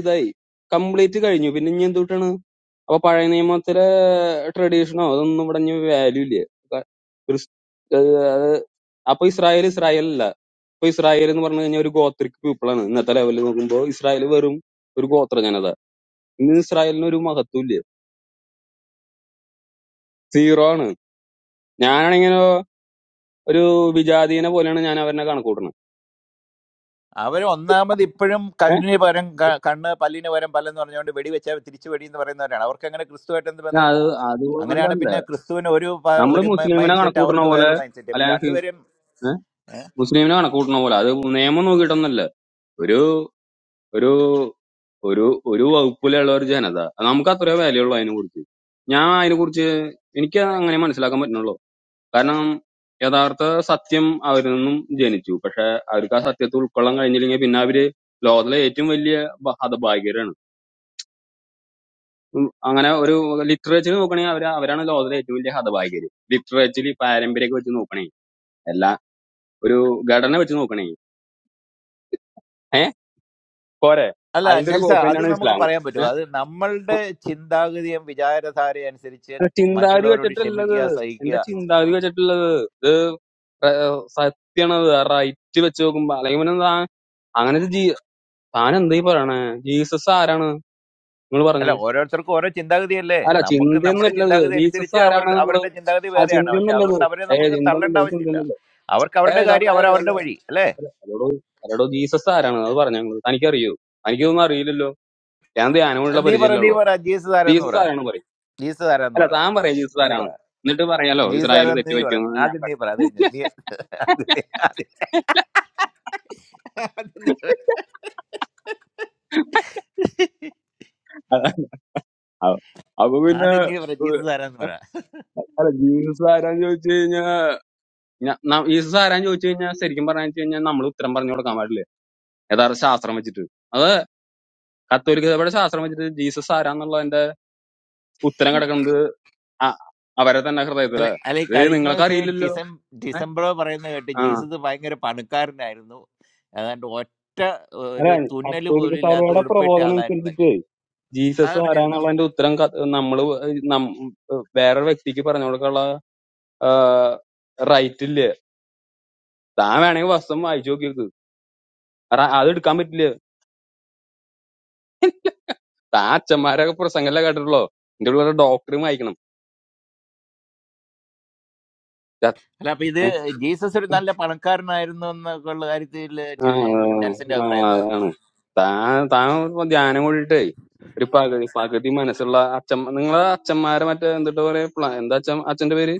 Speaker 12: ഇതായി കംപ്ലീറ്റ് കഴിഞ്ഞു പിന്നെ ഇനി എന്തുട്ടാണ് അപ്പൊ പഴയ നിയമത്തിലെ ട്രഡീഷനോ അതൊന്നും ഇവിടെ വാല്യൂ ഇല്ല ക്രിസ്- ഏ, അത് അപ്പൊ ഇസ്രായേൽ ഇസ്രായേൽ അല്ല, ഇപ്പൊ ഇസ്രായേൽ എന്ന് പറഞ്ഞു കഴിഞ്ഞാൽ ഒരു ഗോത്രിക് പീപ്പിൾ ആണ് ഇന്നത്തെ ലെവലിൽ നോക്കുമ്പോൾ ഇസ്രായേൽ വെറും ഒരു ഗോത്ര ജനത ഇന്ന് ഇസ്രായേലിന് ഒരു മഹത്വം ഇല്ല സീറോ ആണ് ഞാനാണിങ്ങനെ ഒരു വിജാതീനെ പോലെയാണ് ഞാൻ അവരെ കണക്ക് കൂട്ടണത്
Speaker 21: അവർ ഒന്നാമത് ഇപ്പോഴും
Speaker 12: ഏഹ്
Speaker 21: കല്ലിന് പകരം ക- കണ്ണ് പല്ലിന് പകരം പല്ലെന്ന് പറഞ്ഞുകൊണ്ട് വെടിവെച്ച തിരിച്ചു വെടി എന്ന് പറയുന്നവരാണ് അവർക്ക് അങ്ങനെ ക്രിസ്തുവായിട്ട് എന്ത് ബന്ധം
Speaker 12: അത്
Speaker 21: അങ്ങനെയാണ്
Speaker 12: അതുകൊണ്ടല്ല
Speaker 21: പിന്നെ ക്രിസ്തുവിന് ഒരു പ-
Speaker 12: നമ്മള്
Speaker 21: ഒരു
Speaker 12: മുസ്ലിമിനെ
Speaker 21: മൈൻഡ് സെറ്റ്
Speaker 12: കണക്ക് കൂട്ടണ
Speaker 21: അവർക്ക്
Speaker 12: പോലെ
Speaker 21: വേറൊരു മൈൻഡ് സെറ്റ് ഇപ്പൊ
Speaker 12: അല്ലെങ്കിൽ
Speaker 21: രണ്ടുപേരും ഏ?
Speaker 12: മുസ്ലിമിനെ കണക്ക് കൂട്ടണ പോലെ അത് നിയമം നോക്കിയിട്ടൊന്നല്ല ഒരു ഒരു ഒരു ഒരു വകുപ്പിലുള്ള ഒരു ജനത അത് നമുക്ക് അത്രയോ വിലയുള്ളൂ അതിനെ കുറിച്ച് ഞാൻ അതിനെ കുറിച്ച് എനിക്ക് അങ്ങനെ മനസ്സിലാക്കാൻ പറ്റുന്നുള്ളൂ കാരണം യഥാർത്ഥ സത്യം അവരിൽ നിന്നും ജനിച്ചു. പക്ഷെ അവർക്ക് ആ സത്യത്തെ ഉൾക്കൊള്ളാൻ കഴിഞ്ഞില്ലെങ്കിൽ പിന്നെ അവര് ലോകത്തിലെ ഏറ്റവും വലിയ ബ- ഹതഭാഗ്യരാണ്. ഉം അങ്ങനെ ഒരു ലിറ്ററേച്ചർ നോക്കണെങ്കിൽ അവര് അവരാണ് ലോകത്തിലെ ഏറ്റവും വലിയ ഹതഭാഗ്യര്. ലിറ്ററേച്ചറിൽ പാരമ്പര്യമൊക്കെ വെച്ച് നോക്കണെങ്കിൽ എല്ലാ ഒരു ഘടന വെച്ച് നോക്കണെങ്കിൽ ഏഹ് പോരെ
Speaker 21: അല്ല
Speaker 12: അതിന്റെ ഒരു
Speaker 21: നെൽസ
Speaker 12: കോപ്പി
Speaker 21: അത്
Speaker 12: തന്നെയാണ്
Speaker 21: നമുക്ക്
Speaker 12: ഇസ്ലാം
Speaker 21: പറയാൻ പറ്റുമോ
Speaker 12: ഏഹ്
Speaker 21: അത് നമ്മളുടെ ചിന്താഗതിയും വിചാരധാരയും അനുസരിച്ച്
Speaker 12: ചിന്താഗതി
Speaker 21: മറ്റുള്ളവരോട്
Speaker 12: വെച്ചിട്ടുള്ളത്
Speaker 21: ക്ഷമിക്കുക സഹിക്കുക
Speaker 12: എന്റെ ചിന്താഗതി വെച്ചിട്ടുള്ളത് ഇത് സത്യാണത് റൈറ്റ് വെച്ച് നോക്കുമ്പോ അല്ലെങ്കിൽ പിന്നെ താൻ അങ്ങനെ ഒരു ജീ താൻ എന്തായി പറയണേ ജീസസ് ആരാണ് നിങ്ങൾ പറഞ്ഞേ?
Speaker 21: അല്ല ഓരോരുത്തർക്കും ഓരോ ചിന്താഗതിയല്ലേ
Speaker 12: അല്ല
Speaker 21: നമുക്ക് നമ്മുടെ
Speaker 12: ചിന്തയൊന്നുമില്ലത്
Speaker 21: ചിന്താഗതി
Speaker 12: ജീസസ്
Speaker 21: അനുസരിച്ച് അവർ
Speaker 12: ആരാണ് നമ്മള്
Speaker 21: അവരുടെ ചിന്താഗതി
Speaker 12: ആ
Speaker 21: വേറെയാണ് പക്ഷെ
Speaker 12: ചിന്തയൊന്നുമില്ലത്
Speaker 21: അതുകൊണ്ട് അവരെ
Speaker 12: ഏ
Speaker 21: നമുക്ക് തള്ളേണ്ട
Speaker 12: ചിന്തയൊന്നുമില്ല ഒരു
Speaker 21: ആവശ്യമില്ല
Speaker 12: ചിന്തയൊന്നുമില്ല
Speaker 21: അവർക്ക്
Speaker 12: ഏ
Speaker 21: അവരുടെ
Speaker 12: ഇതല്ല
Speaker 21: കാര്യം
Speaker 12: ഏ
Speaker 21: അവർ
Speaker 12: അല്ല
Speaker 21: അവരുടെ വഴി അല്ലേ
Speaker 12: അല്ല. അല്ലടോ ജീസസ് ആരാണ് അത് പറഞ്ഞു ഞങ്ങള് തനിക്കറിയോ എനിക്കൊന്നും അറിയില്ലല്ലോ ഞാൻ ധ്യാനമുള്ള
Speaker 21: നീ പറ നീ
Speaker 12: പരിചയമില്ലല്ലോ
Speaker 21: പറ ജീസസ് ആരാന്ന് പറ
Speaker 12: ജീസസ് ആരാണ് പറയും
Speaker 21: ജീസസ് ആരാന്ന്
Speaker 12: അല്ല
Speaker 21: പറ
Speaker 12: താൻ പറയാം ജീസസ്
Speaker 21: നീ പറ
Speaker 12: ആരാണ് എന്നിട്ട് പറയാലോ
Speaker 21: ജീസസ്
Speaker 12: ഇസ്രായേൽ
Speaker 21: ആരാന്ന്
Speaker 12: തെറ്റ്
Speaker 21: നീ പറ
Speaker 12: പറ്റിയെന്ന് ഞാൻ
Speaker 21: ആദ്യം നീ പറ അത് കഴിഞ്ഞ് നീ ആദ്യം നീ ആദ്യം ആദ്യം നീ പറ.
Speaker 12: അ- അപ്പൊ പിന്നെ
Speaker 21: ആദ്യം നീ പറ
Speaker 12: ഉ-
Speaker 21: ജീസസ് ആരാന്ന് പറ
Speaker 12: അല്ല ജീസസ് ആരാന്ന് ചോദിച്ചു കഴിഞ്ഞാൽ ഞ- ന- ജീസസ് ആരാന്ന് ചോദിച്ചു കഴിഞ്ഞാൽ ശരിക്കും പറഞ്ഞു കഴിഞ്ഞാൽ നമ്മൾ ഉത്തരം പറഞ്ഞു കൊടുക്കാൻ പാടില്ലേ യഥാർത്ഥ ശാസ്ത്രം വെച്ചിട്ട് അത് കത്തോലിക്കതയുടെ ശാസ്ത്രം വെച്ചിട്ട് ജീസസ് ആരാന്നുള്ളതിന്റെ ഉത്തരം കിടക്കുന്നത് അ- അവരെ തന്നെ
Speaker 21: അല്ലെ
Speaker 12: ഹൃദയത്തിലാ
Speaker 21: അല്ലെ
Speaker 12: ഇത്
Speaker 21: കഴിഞ്ഞ
Speaker 12: നിങ്ങൾക്ക്
Speaker 21: ദിവസം
Speaker 12: അറിയില്ലല്ലോ
Speaker 21: ഡിസം
Speaker 12: ഏ?
Speaker 21: ഡിസംബറോ പറയുന്ന കേട്ട്
Speaker 12: ആ
Speaker 21: ജീസസ് ഭയങ്കര പണക്കാരനായിരുന്നു ഏതാണ്ട് ഒറ്റ
Speaker 12: അല്ല
Speaker 21: ഒരു തുന്നൽ
Speaker 12: കത്തോലിക്ക
Speaker 21: പോലും ഇല്ലാത്ത
Speaker 12: സഭയുടെ
Speaker 21: ഉടുപ്പിട്ട
Speaker 12: പ്രബോധനം
Speaker 21: ആളായിരുന്നൊക്കെ
Speaker 12: അനുസരിച്ചിട്ട് ജീസസ്
Speaker 21: അതറിഞ്ഞിരുന്നോ
Speaker 12: ആരാന്നുള്ളതിന്റെ ഉത്തരം ക- നമ്മള് നം- വേറൊരു വ്യക്തിക്ക് പറഞ്ഞു കൊടുക്കാനുള്ള റൈറ്റ് ഇല്ല താൻ വേണമെങ്കിൽ വസ്ത്രം വായിച്ചു നോക്കിയത് അത് എടുക്കാൻ പറ്റില്ല താൻ അച്ഛന്മാരൊക്കെ പ്രസംഗമല്ലേ കേട്ടിട്ടുള്ളോ എന്റെ കൂടെ ഡോക്ടറും വായിക്കണം
Speaker 21: അല്ല അപ്പൊ ഇത് ജീസസ് ഒരു നല്ല പണക്കാരനായിരുന്നു എന്നൊക്കെ ഉള്ള കാര്യത്തിൽ
Speaker 12: ആ
Speaker 21: ടി- നെൽസന്റെ
Speaker 12: ആ,
Speaker 21: അഭിപ്രായം എന്താ
Speaker 12: അതാണ് താൻ താൻ ഇപ്പൊ ധ്യാനം കൂടിയിട്ടേ ഒരു പകുതി പകുതി മനസ്സുള്ള അച്ഛൻ നിങ്ങളെ അച്ഛന്മാരെ മറ്റേ എന്തിട്ട് പറയാ പ്ല- എന്താ അച്ഛൻ അച്ഛന്റെ പേര്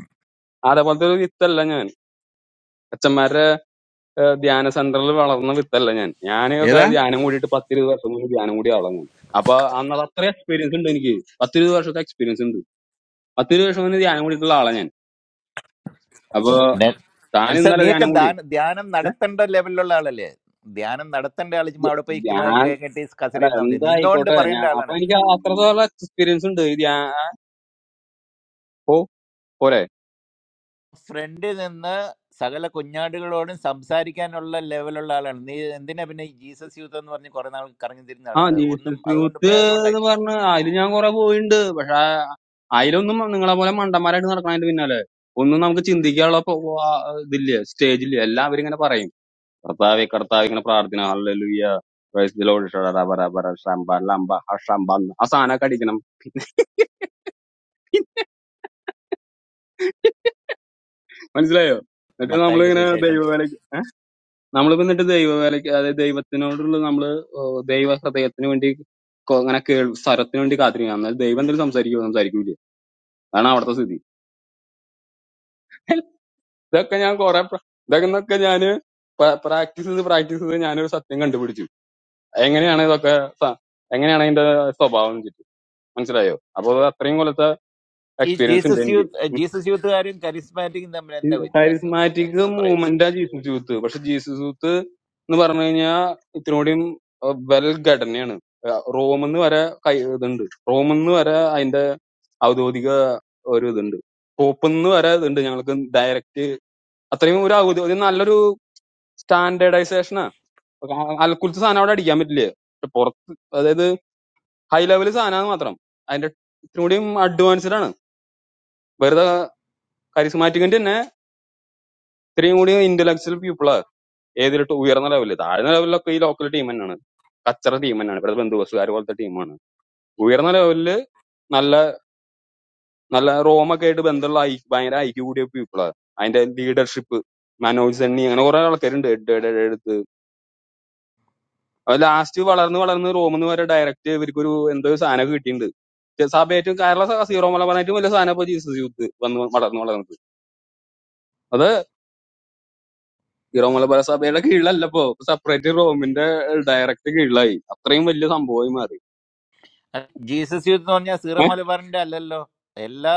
Speaker 12: അതേപോലത്തെ ഒരു വിത്തല്ല ഞാൻ അച്ഛന്മാരുടെ ഏഹ്, ധ്യാന സെന്ററിൽ വളർന്ന വിത്തല്ല ഞാൻ ഞാനൊക്കെ
Speaker 21: ഏതാ
Speaker 12: ധ്യാനം കൂടിയിട്ട് പത്തിരുപത് വർഷം മുന്നേ ധ്യാനം കൂടി വളർന്നു അപ്പൊ അന്നത് അത്ര എക്സ്പീരിയൻസ് ഉണ്ട് എനിക്ക് പത്തിരുപത് വർഷത്തെ എക്സ്പീരിയൻസ് ഉണ്ട് പത്തിരുപത് വർഷം മുന്നേ ധ്യാനം കൂടിയിട്ടുള്ള ആളാ ഞാൻ അപ്പൊ
Speaker 21: നെ-
Speaker 12: താൻ
Speaker 21: നെൽസൺ
Speaker 12: ഇന്നലെ
Speaker 21: നീയൊക്കെ
Speaker 12: ധ്യാനം കൂടി
Speaker 21: ധ്യാന- ധ്യാനം
Speaker 12: ഏ?
Speaker 21: നടത്തേണ്ട ലെവലിലുള്ള ആളല്ലേ ധ്യാനം നടത്തേണ്ട ആള് ചുമ്മാ അവിടെ പോയി ചുമ്മാ
Speaker 12: ഞാൻ
Speaker 21: കേട്ടിട്ട്
Speaker 12: അല്ല
Speaker 21: കസറിയിരുന്നാ മതി നിന്നോണ്ട്
Speaker 12: എന്തായിക്കോട്ടെ
Speaker 21: പറയേണ്ട
Speaker 12: ഞാൻ അപ്പൊ
Speaker 21: ആളാണ് നീ
Speaker 12: എനിക്ക് അത്രത്തോളം എക്സ്പീരിയൻസ് ഉണ്ട് ഓ പോരെ
Speaker 21: ഫ്രണ്ടിൽ നിന്ന് സകല കുഞ്ഞാടുകളോടും സംസാരിക്കാനുള്ള ലെവലുള്ള ആളാണ് നീ എന്തിനാ പിന്നെ ഈ ജീസസ് യൂത്ത് എന്ന് പറഞ്ഞ് കുറെ നാൾ കറങ്ങി തിരിഞ്ഞ്
Speaker 12: ആ
Speaker 21: നടന്നത് ഒന്നും
Speaker 12: ജീസസ്
Speaker 21: അതുകൊണ്ട്
Speaker 12: യൂത്ത്
Speaker 21: പ്രയോജനം
Speaker 12: എന്ന്
Speaker 21: ഉണ്ടായില്ലേ
Speaker 12: പറഞ്ഞ് അതിൽ ഞാൻ കുറെ പോയിണ്ട് പക്ഷെ ആ- അതിലൊന്നും നിങ്ങളെ പോലെ മണ്ടന്മാരായിട്ട് നടക്കണതിന്റെ പിന്നാലെ ഒന്നും നമുക്ക് ചിന്തിക്കാനുള്ള പോ- പോ- ആ ഇതില്ല സ്റ്റേജില്ല എല്ലാം അവരിങ്ങനെ പറയും കർത്താവെ കർത്താവ് ഇങ്ങനെ പ്രാർത്ഥന ഹല്ലേലൂയ പ്രൈസ് ദി ലോർഡ് ഷഡ റബ റബ റ ഷംബ ലംബ ഹ ഷംബ ന്ന്. ആ സാധനമൊക്കെ അടിക്കണം മനസ്സിലായോ എന്നിട്ട്
Speaker 21: മത്തായിയുടെ
Speaker 12: നമ്മളിങ്ങനെ
Speaker 21: സുവിശേഷം
Speaker 12: ദൈവവേലയ്ക്ക് ഏഹ്? നമ്മളിപ്പോ എന്നിട്ട് ദൈവവേലയ്ക്ക് അതായത് ദൈവത്തിനോടുള്ള നമ്മള് ഓ, ദൈവ ഹൃദയത്തിന് വേണ്ടി കൊ- അങ്ങനെ കേൾ സ്വരത്തിന് വേണ്ടി കാത്തിരിക്കണം എന്നാൽ ദൈവം എന്തെങ്കിലും സംസാരിക്കുമോ സംസാരിക്കൂല അതാണ് അവിടുത്തെ സ്ഥിതി ഇതൊക്കെ ഞാൻ കുറെ ഇതൊക്കെ ഇതൊക്കെ എന്നൊക്കെ ഞാന് പ്രാക്ടീസ് ചെയ്ത് പ്രാക്ടീസ് ചെയ്ത് ഞാനൊരു സത്യം കണ്ടുപിടിച്ചു എങ്ങനെയാണ് ഇതൊക്കെ സ- എങ്ങനെയാണ് അതിന്റെ സ്വഭാവം വെച്ചിട്ട് മനസ്സിലായോ അപ്പൊ അത് അത്രയും കൊല്ലത്തെ
Speaker 21: ഈ
Speaker 12: എക്സ്പീരിയൻസ് ഉണ്ട്
Speaker 21: ജീസസ്
Speaker 12: എനിക്ക്
Speaker 21: യൂത്ത് ജീസസ് യൂത്തുകാരും കരിസ്മാറ്റിക്കും തമ്മിൽ എന്താ വ്യത്യാസം
Speaker 12: കരിസ്മാറ്റിക്
Speaker 21: നെൽസ പറയൂ
Speaker 12: മൂവ്മെന്റ് ആ ജീസസ് യൂത്ത് പക്ഷെ ജീസസ് യൂത്ത് എന്ന് പറഞ്ഞു കഴിഞ്ഞാൽ ഇത്രയും വെൽ ഘടനയാണ് റോമെന്ന് വരെ കൈ ഇതുണ്ട് റോമെന്ന് വരെ അതിന്റെ ഔദ്യോഗിക ഒരു ഇതുണ്ട് പോപ്പെന്ന് വരെ ഇതുണ്ട് ഞങ്ങൾക്ക് ഡയറക്റ്റ് അത്രയും ഒരു ഔദ്യോഗിക ഒരു നല്ലൊരു സ്റ്റാൻഡേർഡൈസേഷനാ അൽക്കുലത്തെ സാധനം അവിടെ അടിക്കാൻ പറ്റില്ല പക്ഷെ പുറത്ത് അതായത് ഹൈ ലെവൽ സാധനമാണ് മാത്രം അതിന്റെ ഇത്തിരി കൂടിയും അഡ്വാൻസ്ഡ് ആണ് വെറുതെ കരിസ്മാറ്റിക്കിന്റെ തന്നെ ഇത്രയും കൂടി ഇന്റലക്ച്വൽ പീപ്പിളാ ഏതിലിട്ട് ഉയർന്ന ലെവലിൽ താഴ്ന്ന ലെവലിലൊക്കെ ഈ ലോക്കൽ ടീം തന്നെയാണ് കച്ചറ ടീം തന്നെയാണ് ഇവിടുത്തെ ബന്ധുവസുകാർ പോലത്തെ ടീമാണ് ഉയർന്ന ലെവലില് നല്ല നല്ല റോമൊക്കെ ആയിട്ട് ബന്ധമുള്ള ഐ- ഭയങ്കര ഐക്യ കൂടിയ പീപ്പിളാ അതിന്റെ ലീഡർഷിപ്പ് മനോജ് സണ്ണി അങ്ങനെ കുറെ ആൾക്കാരുണ്ട് ലാസ്റ്റ് വളർന്ന് വളർന്ന് റോമിന്ന് വരെ ഡയറക്റ്റ് ഇവർക്കൊരു എന്തോ ഒരു സാധനം കിട്ടിയിട്ടുണ്ട് ചെ- സഭയായിട്ട് കേരള സ- സീറോ മലബാറായിട്ടും വലിയ സാധനം ഇപ്പൊ ജീസസ് യൂത്ത് വന്ന് വളർന്ന് വളർന്നത് അത് സീറോ മലബാർ സഭയുടെ കീഴിലല്ല ഇപ്പൊ സെപ്പറേറ്റ് റോമിന്റെ ഡയറക്റ്റ് കീഴിലായി അത്രയും വലിയ സംഭവമായി മാറി
Speaker 21: അഹ് ജീസസ് യൂത്ത് എന്ന് പറഞ്ഞാൽ സീറോ
Speaker 12: ഏ?
Speaker 21: മലബാറിന്റെ അല്ലല്ലോ എല്ലാ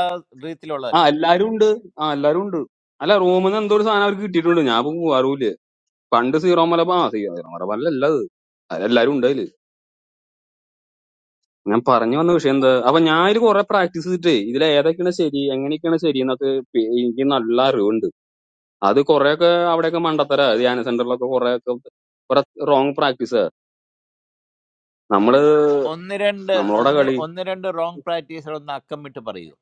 Speaker 12: ആ
Speaker 21: രീതിയിലുള്ളതല്ലേ അത്
Speaker 12: എല്ലാരും ഉണ്ട് ആ എല്ലാരും ഉണ്ട് അല്ല റോമിന്ന് എന്തോ ഒരു സാധനം അവർക്ക് കിട്ടിയിട്ടുണ്ട് ഞാൻ ഇപ്പൊ അറിവില്ല പണ്ട് സീറോ മലബാർ ആ, സീറോ മലബാറിലല്ല അത് അതിലെല്ലാരും ഉണ്ട് അതില് ഞാൻ പറഞ്ഞു വന്ന വിഷയം എന്താ അപ്പൊ ഞാൻ ഇത് കുറെ പ്രാക്ടീസ് ചെയ്തിട്ടേ ഇതിൽ ഏതൊക്കെയാണ് ശരി എങ്ങനെയൊക്കെയാണ് ശരി എന്നൊക്കെ പി- എനിക്ക് നല്ല അറിവുണ്ട് അത് കുറെയൊക്കെ അവിടെയൊക്കെ മണ്ടത്തരാ ധ്യാന സെന്ററിലൊക്കെ കുറെയൊക്കെ കുറെ റോങ് പ്രാക്ടീസ് നമ്മള്
Speaker 21: ഒന്ന് രണ്ട്
Speaker 12: നമ്മളോടെ
Speaker 21: ഒന്ന്
Speaker 12: കളി
Speaker 21: ഒന്ന് രണ്ട് റോങ് പ്രാക്ടീസുകൾ ഒന്ന് അക്കം വിട്ട് പറയൂ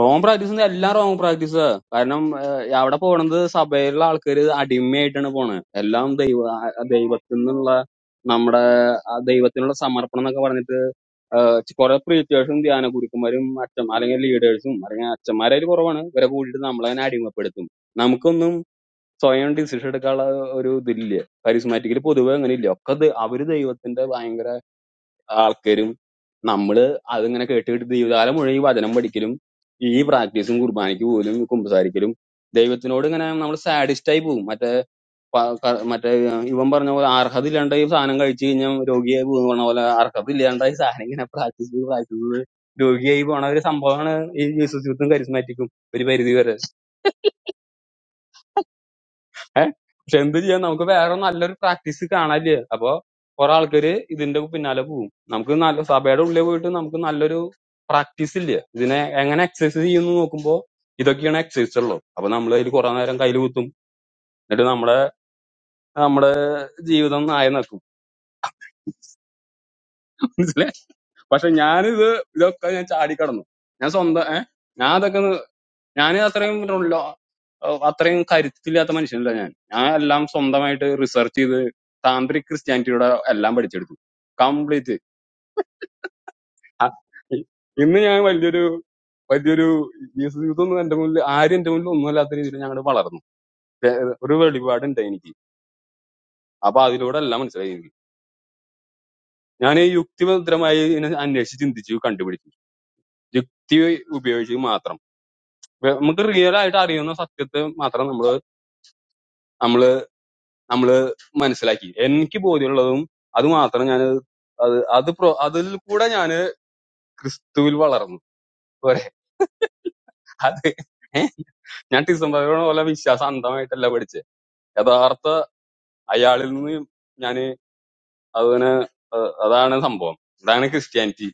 Speaker 12: റോങ് പ്രാക്ടീസ് എല്ലാം റോങ് പ്രാക്ടീസ് കാരണം ഏഹ്, അവിടെ പോണത് സഭയിലുള്ള ആൾക്കാര് അടിമയായിട്ടാണ് പോണത് എല്ലാം ദൈവ ആ ദൈവത്തിൽ നിന്നുള്ള നമ്മുടെ ആ ദൈവത്തിനുള്ള സമർപ്പണം എന്നൊക്കെ പറഞ്ഞിട്ട് ഏഹ്, ചി- കുറെ പ്രീറ്റേഴ്സും ധ്യാന ഗുരുക്കന്മാരും അച്ഛൻ അല്ലെങ്കിൽ ലീഡേഴ്സും അല്ലെങ്കിൽ അച്ഛന്മാരായാലും കുറവാണ് ഇവരെ കൂടിയിട്ട് നമ്മളെ തന്നെ അടിമപ്പെടുത്തും നമുക്കൊന്നും സ്വയം ഡിസിഷൻ എടുക്കാനുള്ള ഒരു ഇതില്ല കരിസ്മാറ്റിക്കിൽ പൊതുവെ അങ്ങനെ ഇല്ല ഒക്കെ ദ- അവര് ദൈവത്തിന്റെ ഭയങ്കര ആൾക്കാരും നമ്മള് അതിങ്ങനെ കേട്ട് കേട്ട് ദൈവകാലം മുഴുവൻ ഈ വചനം പഠിക്കലും ഈ പ്രാക്ടീസും കുർബാനയ്ക്ക് പോലും കുമ്പസാരിക്കലും ദൈവത്തിനോട് ഇങ്ങനെ നമ്മൾ സാഡിസ്റ്റ് ആയി പോകും മറ്റേ പ- ക- മറ്റേ ഇവൻ പറഞ്ഞ പോലെ അർഹത ഇല്ലാണ്ടായി സാധനം കഴിച്ചു കഴിഞ്ഞാൽ രോഗിയായി പോകുന്ന പറഞ്ഞ പോലെ അർഹത ഇല്ലാണ്ടായി സാധനം ഇങ്ങനെ പ്രാക്ടീസ് പ്രാക്ടീസ് രോഗിയായി പോണ ഒരു സംഭവമാണ് ഈ ജീസസ് യൂത്തും കരിസ്മാറ്റിക്കും ഒരു പരിധി വരെ ഏഹ് പക്ഷെ എന്ത് ചെയ്യാൻ നമുക്ക് വേറെ നല്ലൊരു പ്രാക്ടീസ് കാണാനില്ല അപ്പൊ കുറെ ആൾക്കാര് ഇതിന്റെ പിന്നാലെ പോകും നമുക്ക് നല്ല സഭയുടെ ഉള്ളിൽ പോയിട്ട് നമുക്ക് നല്ലൊരു പ്രാക്ടീസ് ഇല്ല ഇതിനെ എങ്ങനെ എക്സസൈസ് ചെയ്യുന്നു നോക്കുമ്പോ ഇതൊക്കെയാണ് എക്സസൈസ് ഉള്ളത് അപ്പൊ നമ്മൾ അതിൽ കുറെ നേരം കയ്യിൽ കുത്തും എന്നിട്ട് നമ്മുടെ നമ്മുടെ ജീവിതം നായ നടക്കും മനസ്സിലായി പക്ഷെ ഞാനിത് ഇതൊക്കെ ഞാൻ ചാടിക്കടന്നു ഞാൻ സ്വന്തം ഏഹ് ഞാൻ അതൊക്കെ ഞാൻ അത്രയും ഉള്ള- അത്രയും കരുത്തില്ലാത്ത മനുഷ്യനല്ല ഞാൻ ഞാൻ എല്ലാം സ്വന്തമായിട്ട് റിസർച്ച് ചെയ്ത് താന്ത്രിക് ക്രിസ്ത്യാനിറ്റിയുടെ എല്ലാം പഠിച്ചെടുത്തു കംപ്ലീറ്റ് ഇന്ന് ഞാൻ വലിയൊരു വലിയൊരു യേശു ഇതൊന്നും എന്റെ മുന്നിൽ ആരും എന്റെ മുന്നിൽ ഒന്നും അല്ലാത്ത രീതിയിൽ ഞങ്ങൾ വളർന്നു ഏ, ഒരു വെളിപാടുണ്ട് എനിക്ക് അപ്പൊ അതിലൂടെ എല്ലാം മനസ്സിലായി എനിക്ക്. ഞാൻ ഈ യുക്തിഭദ്രമായി ഇതിനെ അന്വേഷിച്ച് ചിന്തിച്ചു കണ്ടുപിടിച്ചു യുക്തി ഉപയോഗിച്ച് മാത്രം വെ- നമുക്ക് റിയൽ ആയിട്ട് അറിയുന്ന സത്യത്തെ മാത്രം നമ്മൾ നമ്മള് മനസ്സിലാക്കി എനിക്ക് ബോധ്യമുള്ളതും അത് മാത്രം ഞാൻ അത് അത് പ്രോ അതിൽ കൂടെ ഞാൻ ക്രിസ്തുവിൽ വളർന്നു പോരെ അത് ഏ? ഞാൻ ഡിസംബർ പോലെ വിശ്വാസം അന്ധമായിട്ടല്ല പഠിച്ചത് യഥാർത്ഥ അയാളിൽ നിന്ന് ഞാൻ അതിനെ അഹ് അതാണ് സംഭവം അതാണ് ക്രിസ്ത്യാനിറ്റി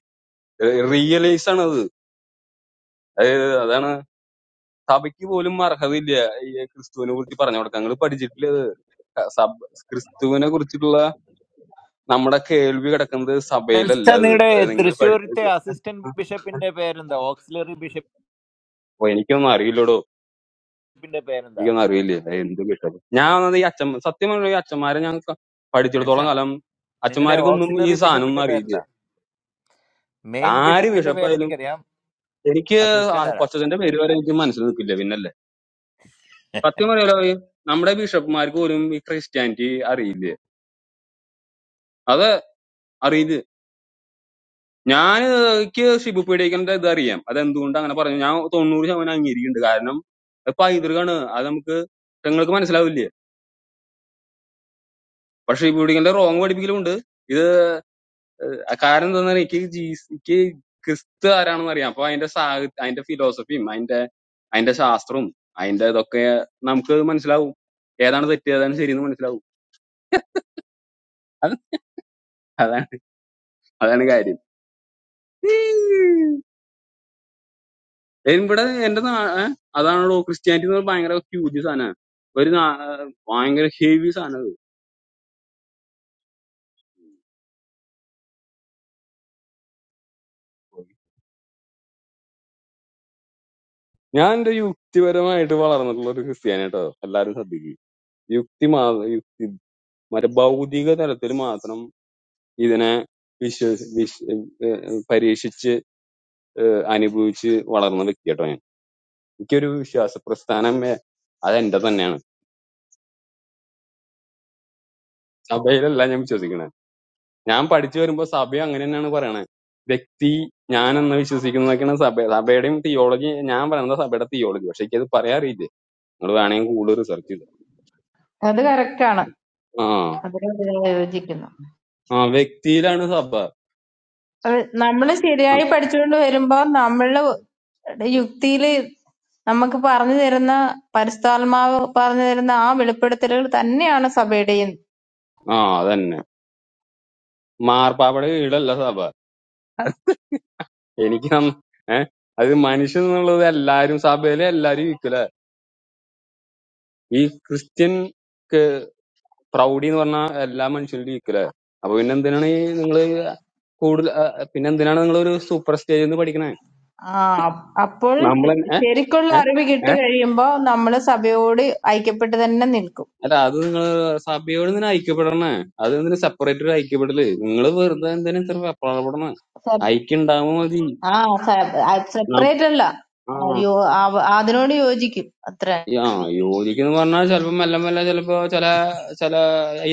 Speaker 12: റിയലൈസ് ആണ് അത് അതായത് അതാണ് സഭയ്ക്ക് പോലും അർഹതയില്ല ഈ ക്രിസ്തുവിനെ കുറിച്ച് പറഞ്ഞു കൊടുക്കാൻ നിങ്ങൾ പഠിച്ചിട്ടില്ല ഇത്. സഭ ക്രിസ്തുവിനെ കുറിച്ചിട്ടുള്ള നമ്മുടെ കേൾവി കിടക്കുന്നത് സഭയിലല്ല
Speaker 21: നെൽസ
Speaker 12: അത്
Speaker 21: നിങ്ങളുടെ
Speaker 12: അത് നിങ്ങൾ
Speaker 21: തൃശ്ശൂരത്തെ
Speaker 12: പഠിച്ചെടുക്കുക
Speaker 21: അസിസ്റ്റന്റ് ബിഷപ്പിന്റെ പേരെന്താ ഓക്സിലറി
Speaker 12: അപ്പൊ എനിക്കൊന്നും അറിയില്ലടോ
Speaker 21: ബിഷപ്പിന്റെ പേരെന്താ
Speaker 12: എനിക്കൊന്നും അറിയില്ല ഇത് എന്ത് കിട്ടും ഞാൻ വന്നത് ഈ അച്ഛൻ സത്യം പറഞ്ഞ ഈ അച്ഛന്മാരെ ഞാൻ ക-
Speaker 21: നെൽസ
Speaker 12: പഠിച്ചിടത്തോളം കാലം
Speaker 21: നിങ്ങളുടെ
Speaker 12: അച്ഛന്മാർക്കൊന്നും ഈ
Speaker 21: ഓക്സിലറി
Speaker 12: സാധനം ഒന്നും
Speaker 21: ബിഷപ്പിന്റെ
Speaker 12: അറിയില്ല
Speaker 21: പേരെന്താ മെയിൻ
Speaker 12: ആര്
Speaker 21: ബിഷപ്പിന്റെ
Speaker 12: ബിഷപ്പായാലും
Speaker 21: പേരെനിക്കറിയാം
Speaker 12: എനിക്ക് ആ
Speaker 21: അസിസ്റ്റന്റ് ആരാ
Speaker 12: കൊച്ചച്ഛന്റെ പേര് വരെ എനിക്ക് മനസ്സിൽ നിൽക്കില്ല പിന്നല്ലേ സത്യം പറയാലോ ഈ നമ്മുടെ ബിഷപ്പ്മാർക്ക് പോലും ഈ ക്രിസ്ത്യാനിറ്റി അറിയില്ല അത് അറിയില്ല ഞാൻ എനിക്ക് ഷിബു പീഡിക്കന്റെ ഇത് അറിയാം അത് എന്തുകൊണ്ട് അങ്ങനെ പറഞ്ഞു ഞാൻ തൊണ്ണൂറ് ശതമാനം അംഗീകരിക്കുന്നുണ്ട് കാരണം അത് പൈതൃകാണ് അത് നമുക്ക് നിങ്ങൾക്ക് മനസ്സിലാവില്ലേ പക്ഷെ ഈ പീഡിക്കന്റെ റോങ് പഠിപ്പിക്കലുണ്ട് ഇത് അത് കാരണം എന്താന്ന് പറഞ്ഞാ എനിക്ക് ജീസ് എനിക്ക് ക്രിസ്തു ആരാണെന്ന് അറിയാം അപ്പൊ അതിന്റെ സാഹ അതിന്റെ ഫിലോസഫിയും അതിന്റെ അതിന്റെ ശാസ്ത്രവും അതിന്റെ ഇതൊക്കെ നമുക്ക് മനസ്സിലാവും ഏതാണ് തെറ്റ് ഏതാണ് ശരിയെന്ന് മനസ്സിലാവും അത് അതാണ് അതാണ് കാര്യം ഏ, ഇവിടെ എന്റെ നാ ഏ? അതാണല്ലോ ക്രിസ്ത്യാനിറ്റി എന്ന് പറഞ്ഞാൽ ഭയങ്കര ഹ്യൂജ് സാധനമാണ് ഒരു നാ- ഭയങ്കര ഹെവി സാധനം അത്. ഞാൻ എന്റെ യുക്തിപരമായിട്ട് വളർന്നിട്ടുള്ള ഒരു ക്രിസ്ത്യാനി കേട്ടോ എല്ലാരും ശ്രദ്ധിക്കും യുക്തി മാ യുക്തി മറ്റേ ഭൗതിക തലത്തിൽ മാത്രം ഇതിനെ വിശ്വസി വിശ് ഏഹ് ഏഹ് പരീക്ഷിച്ച് ഏഹ് അനുഭവിച്ച് വളർന്ന വ്യക്തി കേട്ടോ ഞാൻ എനിക്കൊരു വിശ്വാസ പ്രസ്ഥാനം വേ- അതെന്റെ തന്നെയാണ് സഭയിലല്ല ഞാൻ വിശ്വസിക്കുന്നത് ഞാൻ പഠിച്ചു വരുമ്പോ സഭ അങ്ങനെ തന്നെയാണ് പറയണത് വ്യക്തി ഞാൻ എന്ന് വിശ്വസിക്കുന്നതൊക്കെയാണ് സഭ സഭയുടെയും തിയോളജി ഞാൻ പറയുന്നത് സഭയുടെ തിയോളജി പക്ഷെ എനിക്കത് പറയാൻ അറിയില്ലേ നിങ്ങൾ വേണമെങ്കിൽ കൂടുതൽ റിസർച്ച് ചെയ്തു
Speaker 13: അത് കറക്റ്റാണ്
Speaker 12: ആ
Speaker 13: അതിനോട് ഞാൻ യോജിക്കുന്നു
Speaker 12: ആ വ്യക്തിയിലാണ് സഭ
Speaker 13: അത് നമ്മൾ ശരിയായി പഠിച്ചുകൊണ്ട് വരുമ്പോ നമ്മള് യുക്തിയില് നമുക്ക് പറഞ്ഞു തരുന്ന പരിശുദ്ധാത്മാവ് പറഞ്ഞു തരുന്ന ആ വെളിപ്പെടുത്തലുകൾ തന്നെയാണ് സഭയുടെയും
Speaker 12: ആ അതന്നെ മാർപ്പാപ്പയുടെ വീടല്ല സഭ എനിക്ക് നം- ഏ അത് മനുഷ്യൻ എന്നുള്ളത് എല്ലാരും സഭയിലെ എല്ലാരും ഈ ക്രിസ്ത്യൻ ക്ക് പ്രൗഢി എന്ന് പറഞ്ഞാൽ എല്ലാ മനുഷ്യരിലും ഈക്വൽ അപ്പൊ പിന്നെ എന്തിനാണ് ഈ നിങ്ങൾ കൂടുതൽ ആ, പിന്നെ എന്തിനാണ് നിങ്ങൾ ഒരു സൂപ്പർ സ്റ്റേജിൽ നിന്ന് പഠിക്കണേ
Speaker 13: ആ അ- അപ്പോൾ ശ-
Speaker 12: നമ്മളെ ഏ
Speaker 13: ശരിക്കുള്ള
Speaker 12: ഏ
Speaker 13: അറിവ് കിട്ടി
Speaker 12: ഏ?
Speaker 13: കഴിയുമ്പോ നമ്മള് സഭയോട് ഐക്യപ്പെട്ട് തന്നെ നിൽക്കും
Speaker 12: അല്ല അത് നിങ്ങൾ സഭയോട് ഇതിന് ഐക്യപ്പെടണേ അത് ഇതിന് സെപ്പറേറ്റ് ഒരു ഐക്യപ്പെടല് നിങ്ങൾ വെറുതെ എന്തിനാ ഇത്ര വെപ്രാളപ്പെടണേ
Speaker 13: സ-
Speaker 12: ഐക്യം ഉണ്ടാവുമ്പോ മതി
Speaker 13: ആ
Speaker 12: നാം-
Speaker 13: സെപ്പറേറ്റ് അല്ല
Speaker 12: ആ
Speaker 13: ആ, യോ- ആ- അതിനോട് യോജിക്കും അത്ര
Speaker 12: ഈ ആ യോജിക്കുന്നു പറഞ്ഞാൽ ചിലപ്പോ മെല്ലെ മെല്ലെ ചിലപ്പോ ചില ചില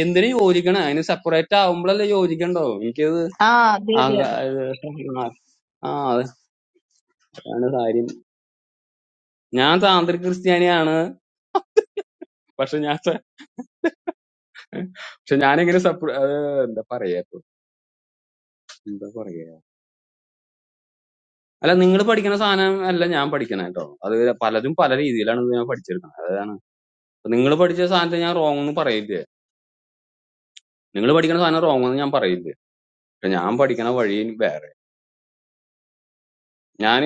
Speaker 12: എന്തിനു യോജിക്കണേ അതിന് സെപ്പറേറ്റ് ആവുമ്പോഴല്ലേ യോജിക്കണ്ടോ എനിക്കത്
Speaker 13: ആ അതെ അതെ
Speaker 12: ആക-
Speaker 13: അതെ
Speaker 12: ആ ആ, അതാണ് കാര്യം ഞാൻ താന്ത്രിക ക്രിസ്ത്യാനിയാണ് പക്ഷെ ഞാൻ സ- പക്ഷെ ഞാനിങ്ങനെ സപ്ര ഏഹ് എന്താ പറയാ ഇപ്പൊ? എന്താ പറയാ അല്ല നിങ്ങൾ പഠിക്കുന്ന സാധനം അല്ല ഞാൻ പഠിക്കണ കേട്ടോ അത് പലതും പല രീതിയിലാണ് ഇത് ഞാൻ പഠിച്ചെടുക്കുന്നത് അതാണ് നിങ്ങൾ പഠിച്ച സാധനത്തെ ഞാൻ റോങ് എന്ന് പറയില്ലേ നിങ്ങൾ പഠിക്കുന്ന സാധനം റോങ് എന്ന് ഞാൻ പറയില്ലേ പക്ഷെ ഞാൻ പഠിക്കണ വഴി വേറെ ഞാൻ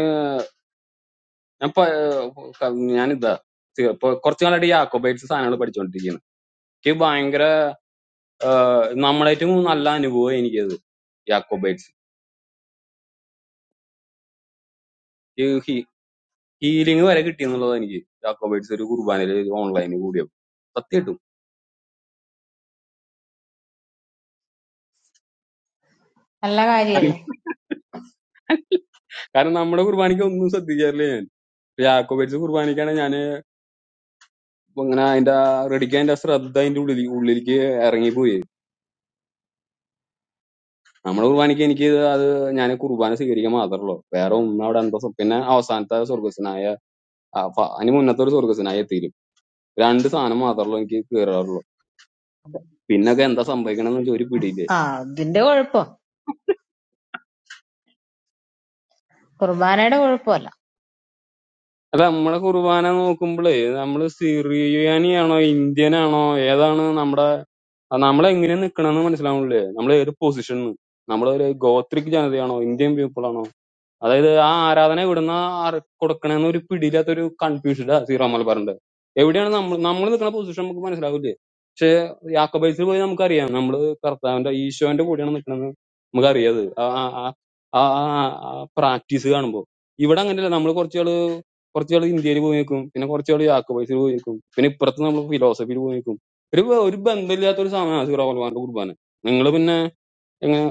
Speaker 12: ഞാൻ പ- ഏഹ് ഞാനിതാ തി- ഇപ്പൊ കുറച്ചു കാലമായിട്ട് യാക്കോബൈറ്റ്സ് സാധനങ്ങൾ പഠിച്ചുകൊണ്ടിരിക്കുന്നത് എനിക്ക് ഭയങ്കര ഏഹ് നമ്മളേറ്റവും നല്ല അനുഭവം എനിക്കത് യാക്കോബൈറ്റ്സ് ഹീലിംഗ് വരെ കിട്ടിയെന്നുള്ളത് എനിക്ക് ജാക്കോബൈറ്റ്സ് ഒരു കുർബാനയിൽ ഓൺലൈനിൽ കൂടിയപ്പോൾ സത്യമായിട്ടും
Speaker 13: നല്ല കാര്യല്ലേ
Speaker 12: കാരണം നമ്മുടെ കുർബാനയ്ക്ക് ഒന്നും ശ്രദ്ധിക്കാറില്ല ഞാൻ. ജാക്കോബൈറ്റ്സ് കുർബാനയ്ക്കാണ് ഞാൻ ഇങ്ങനെ അതിന്റെ റെഡിക്ക് അതിന്റെ ശ്രദ്ധ അതിന്റെ ഉള്ളിൽ ഉള്ളിലേക്ക് ഇറങ്ങിപ്പോയി നമ്മുടെ കുർബാനയ്ക്ക് എനിക്ക് ഇത് അത് ഞാൻ കുർബാന സ്വീകരിക്കാൻ മാത്രമല്ലോ വേറെ ഒന്നും അവിടെ എന്തോ സ്വ- പിന്നെ അവസാനത്തെ സ്വർഗസ്വനായ ആ, ഫ- അതിന് മുന്നത്തെ ഒരു സ്വർഗസ്വനായ എത്തിയിരും രണ്ട് സാധനം മാത്രമല്ലോ എനിക്ക് കയറാറുള്ളൂ പിന്നൊക്കെ എന്താ സംഭവിക്കണമെന്ന് വെച്ചാൽ ഒരു പിടിയില്ല
Speaker 13: ആ അതിന്റെ കുഴപ്പം കുർബാനയുടെ കുഴപ്പമല്ല
Speaker 12: അല്ല നമ്മളെ കുർബാന നോക്കുമ്പോഴേ നമ്മള് സിറിയാനിയാണോ ഇന്ത്യൻ ആണോ ഏതാണ് നമ്മുടെ നമ്മൾ എങ്ങനെ നിക്കണെന്ന് മനസ്സിലാവണില്ലേ നമ്മൾ ഏത് പൊസിഷനിൽ നമ്മളൊരു ഗോത്രിക് ജനതയാണോ ഇന്ത്യൻ പീപ്പിൾ ആണോ അതായത് ആ ആരാധന എവിടുന്ന കൊടുക്കണെന്ന് ഒരു പിടിയില്ലാത്തൊരു കൺഫ്യൂഷനാ സീറോ മലബാറിന്റെ എവിടെയാണ് നമ്മൾ നമ്മൾ നിൽക്കുന്ന പൊസിഷൻ നമുക്ക് മനസ്സിലാവില്ലേ പക്ഷെ യാക്കോബൈസിൽ പോയി നമുക്കറിയാം നമ്മൾ കർത്താവിന്റെ ഈശോന്റെ കൂടെയാണ് നിൽക്കുന്നത് നമുക്കറിയാത് ആ ആ പ്രാക്ടീസ് കാണുമ്പോൾ ഇവിടെ അങ്ങനെയല്ല നമ്മൾ കുറച്ചുകള് കുറച്ചുകൾ ഇന്ത്യയിൽ പോയി നിൽക്കും പിന്നെ കുറച്ചുകൾ യാക്കോബൈസിൽ പോയി നിൽക്കും പിന്നെ ഇപ്പുറത്ത് നമ്മൾ ഫിലോസഫിയിൽ പോയി നിൽക്കും ഒരു ഒരു ബന്ധമില്ലാത്ത ഒരു സമയമാണ് സീറോ മലബാറിന്റെ കുർബാന നിങ്ങൾ പിന്നെ എങ്ങനെ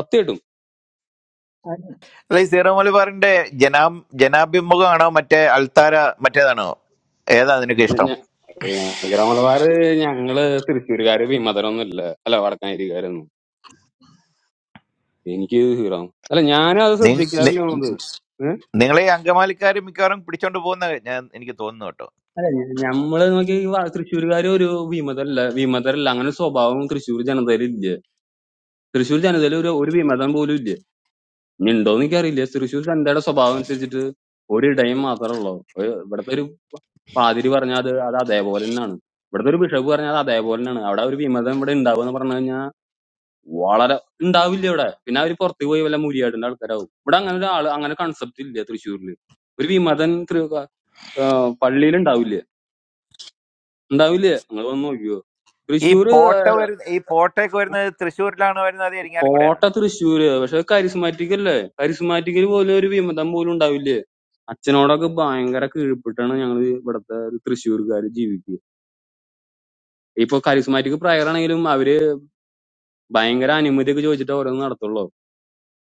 Speaker 12: സത്യമായിട്ടും
Speaker 21: അല്ല ഈ സീറോ മലബാറിന്റെ ജനാ ജനാഭിമുഖമാണോ മറ്റേ അൾത്താര മറ്റേതാണോ ഏതാ നിനക്ക് ഇഷ്ടം
Speaker 12: ഹീറോ മലബാർ ഞങ്ങള് തൃശ്ശൂരുകാര് വിമതരൊന്നും ഇല്ല അല്ല വടക്കാനരിക്കാരൊന്നും എനിക്ക് ഹീറോ അല്ല ഞാനും അത്
Speaker 21: നി- നി-
Speaker 12: ശ്രദ്ധിക്കാറില്ല അത് ഏഹ്?
Speaker 21: നിങ്ങളെ ഈ അങ്കമാലിക്കാർ മിക്കവാറും പിടിച്ചോണ്ട് പോകുന്ന ഞാൻ എനിക്ക് തോന്നുന്നു കേട്ടോ
Speaker 12: അല്ല ഞ- ഞമ്മള് നോക്കി തൃശ്ശൂരുകാര് ഒരു വിമതല്ല വിമതരല്ല അങ്ങനെ ഒരു സ്വഭാവം തൃശ്ശൂർ ജനതയിൽ ഇല്ല തൃശ്ശൂർ ജനതയിൽ ഒരു ഒരു വിമതം പോലും ഇല്ല ഇനി ഉണ്ടോന്ന് എനിക്കറിയില്ല തൃശ്ശൂർ ജനതയുടെ സ്വഭാവം അനുസരിച്ചിട്ട് ഒരിടയും മാത്രമേ ഉള്ളൂ ഒരു- ഇവിടുത്തെ ഒരു പാതിരി പറഞ്ഞാൽ അത് അത് അതേപോലെ തന്നെയാണ് ഇവിടുത്തെ ഒരു ബിഷപ്പ് പറഞ്ഞാൽ അത് അതേപോലെ തന്നെയാണ് അവിടെ ഒരു വിമതം ഇവിടെ ഉണ്ടാവുക എന്ന് പറഞ്ഞു വളരെ ഉണ്ടാവില്ല ഇവിടെ പിന്നെ അവര് പുറത്ത് പോയി വല്ല മുരിയാടിന്റെ ആൾക്കാരാവും ഇവിടെ അങ്ങനെ ഒരാള് അങ്ങനെ കൺസെപ്റ്റ് ഇല്ല തൃശ്ശൂരില് ഒരു വിമതൻ പള്ളിയിൽ ഉണ്ടാവില്ല ഉണ്ടാവില്ല നിങ്ങൾ വന്ന് നോക്കിയോ
Speaker 21: ഈ
Speaker 12: തൃശ്ശൂര്
Speaker 21: പോട്ട വരുന്ന ഈ പോട്ടയൊക്കെ വരുന്നത് തൃശ്ശൂരിലാണ് വരുന്നത് അത് ഇരിങ്ങാലിക്കൂടെയാണ്
Speaker 12: കോട്ട
Speaker 21: ഇവിടെ
Speaker 12: തൃശ്ശൂര് പക്ഷെ കരിസ്മാറ്റിക് അല്ലേ കരിസ്മാറ്റിക്കിൽ പോലും ഒരു വിമതം പോലും ഉണ്ടാവില്ലേ അച്ഛനോടൊക്കെ ഭയങ്കര കീഴ്പ്പെട്ടാണ് ഞങ്ങൾ ഇവിടുത്തെ ഒരു തൃശ്ശൂർക്കാര് ജീവിക്കുക ഇപ്പൊ കരിസ്മാറ്റിക് പ്രയറാണെങ്കിലും അവര് ഭയങ്കര അനുമതിയൊക്കെ ചോദിച്ചിട്ട് ഓരോന്ന് നടത്തുള്ളൂ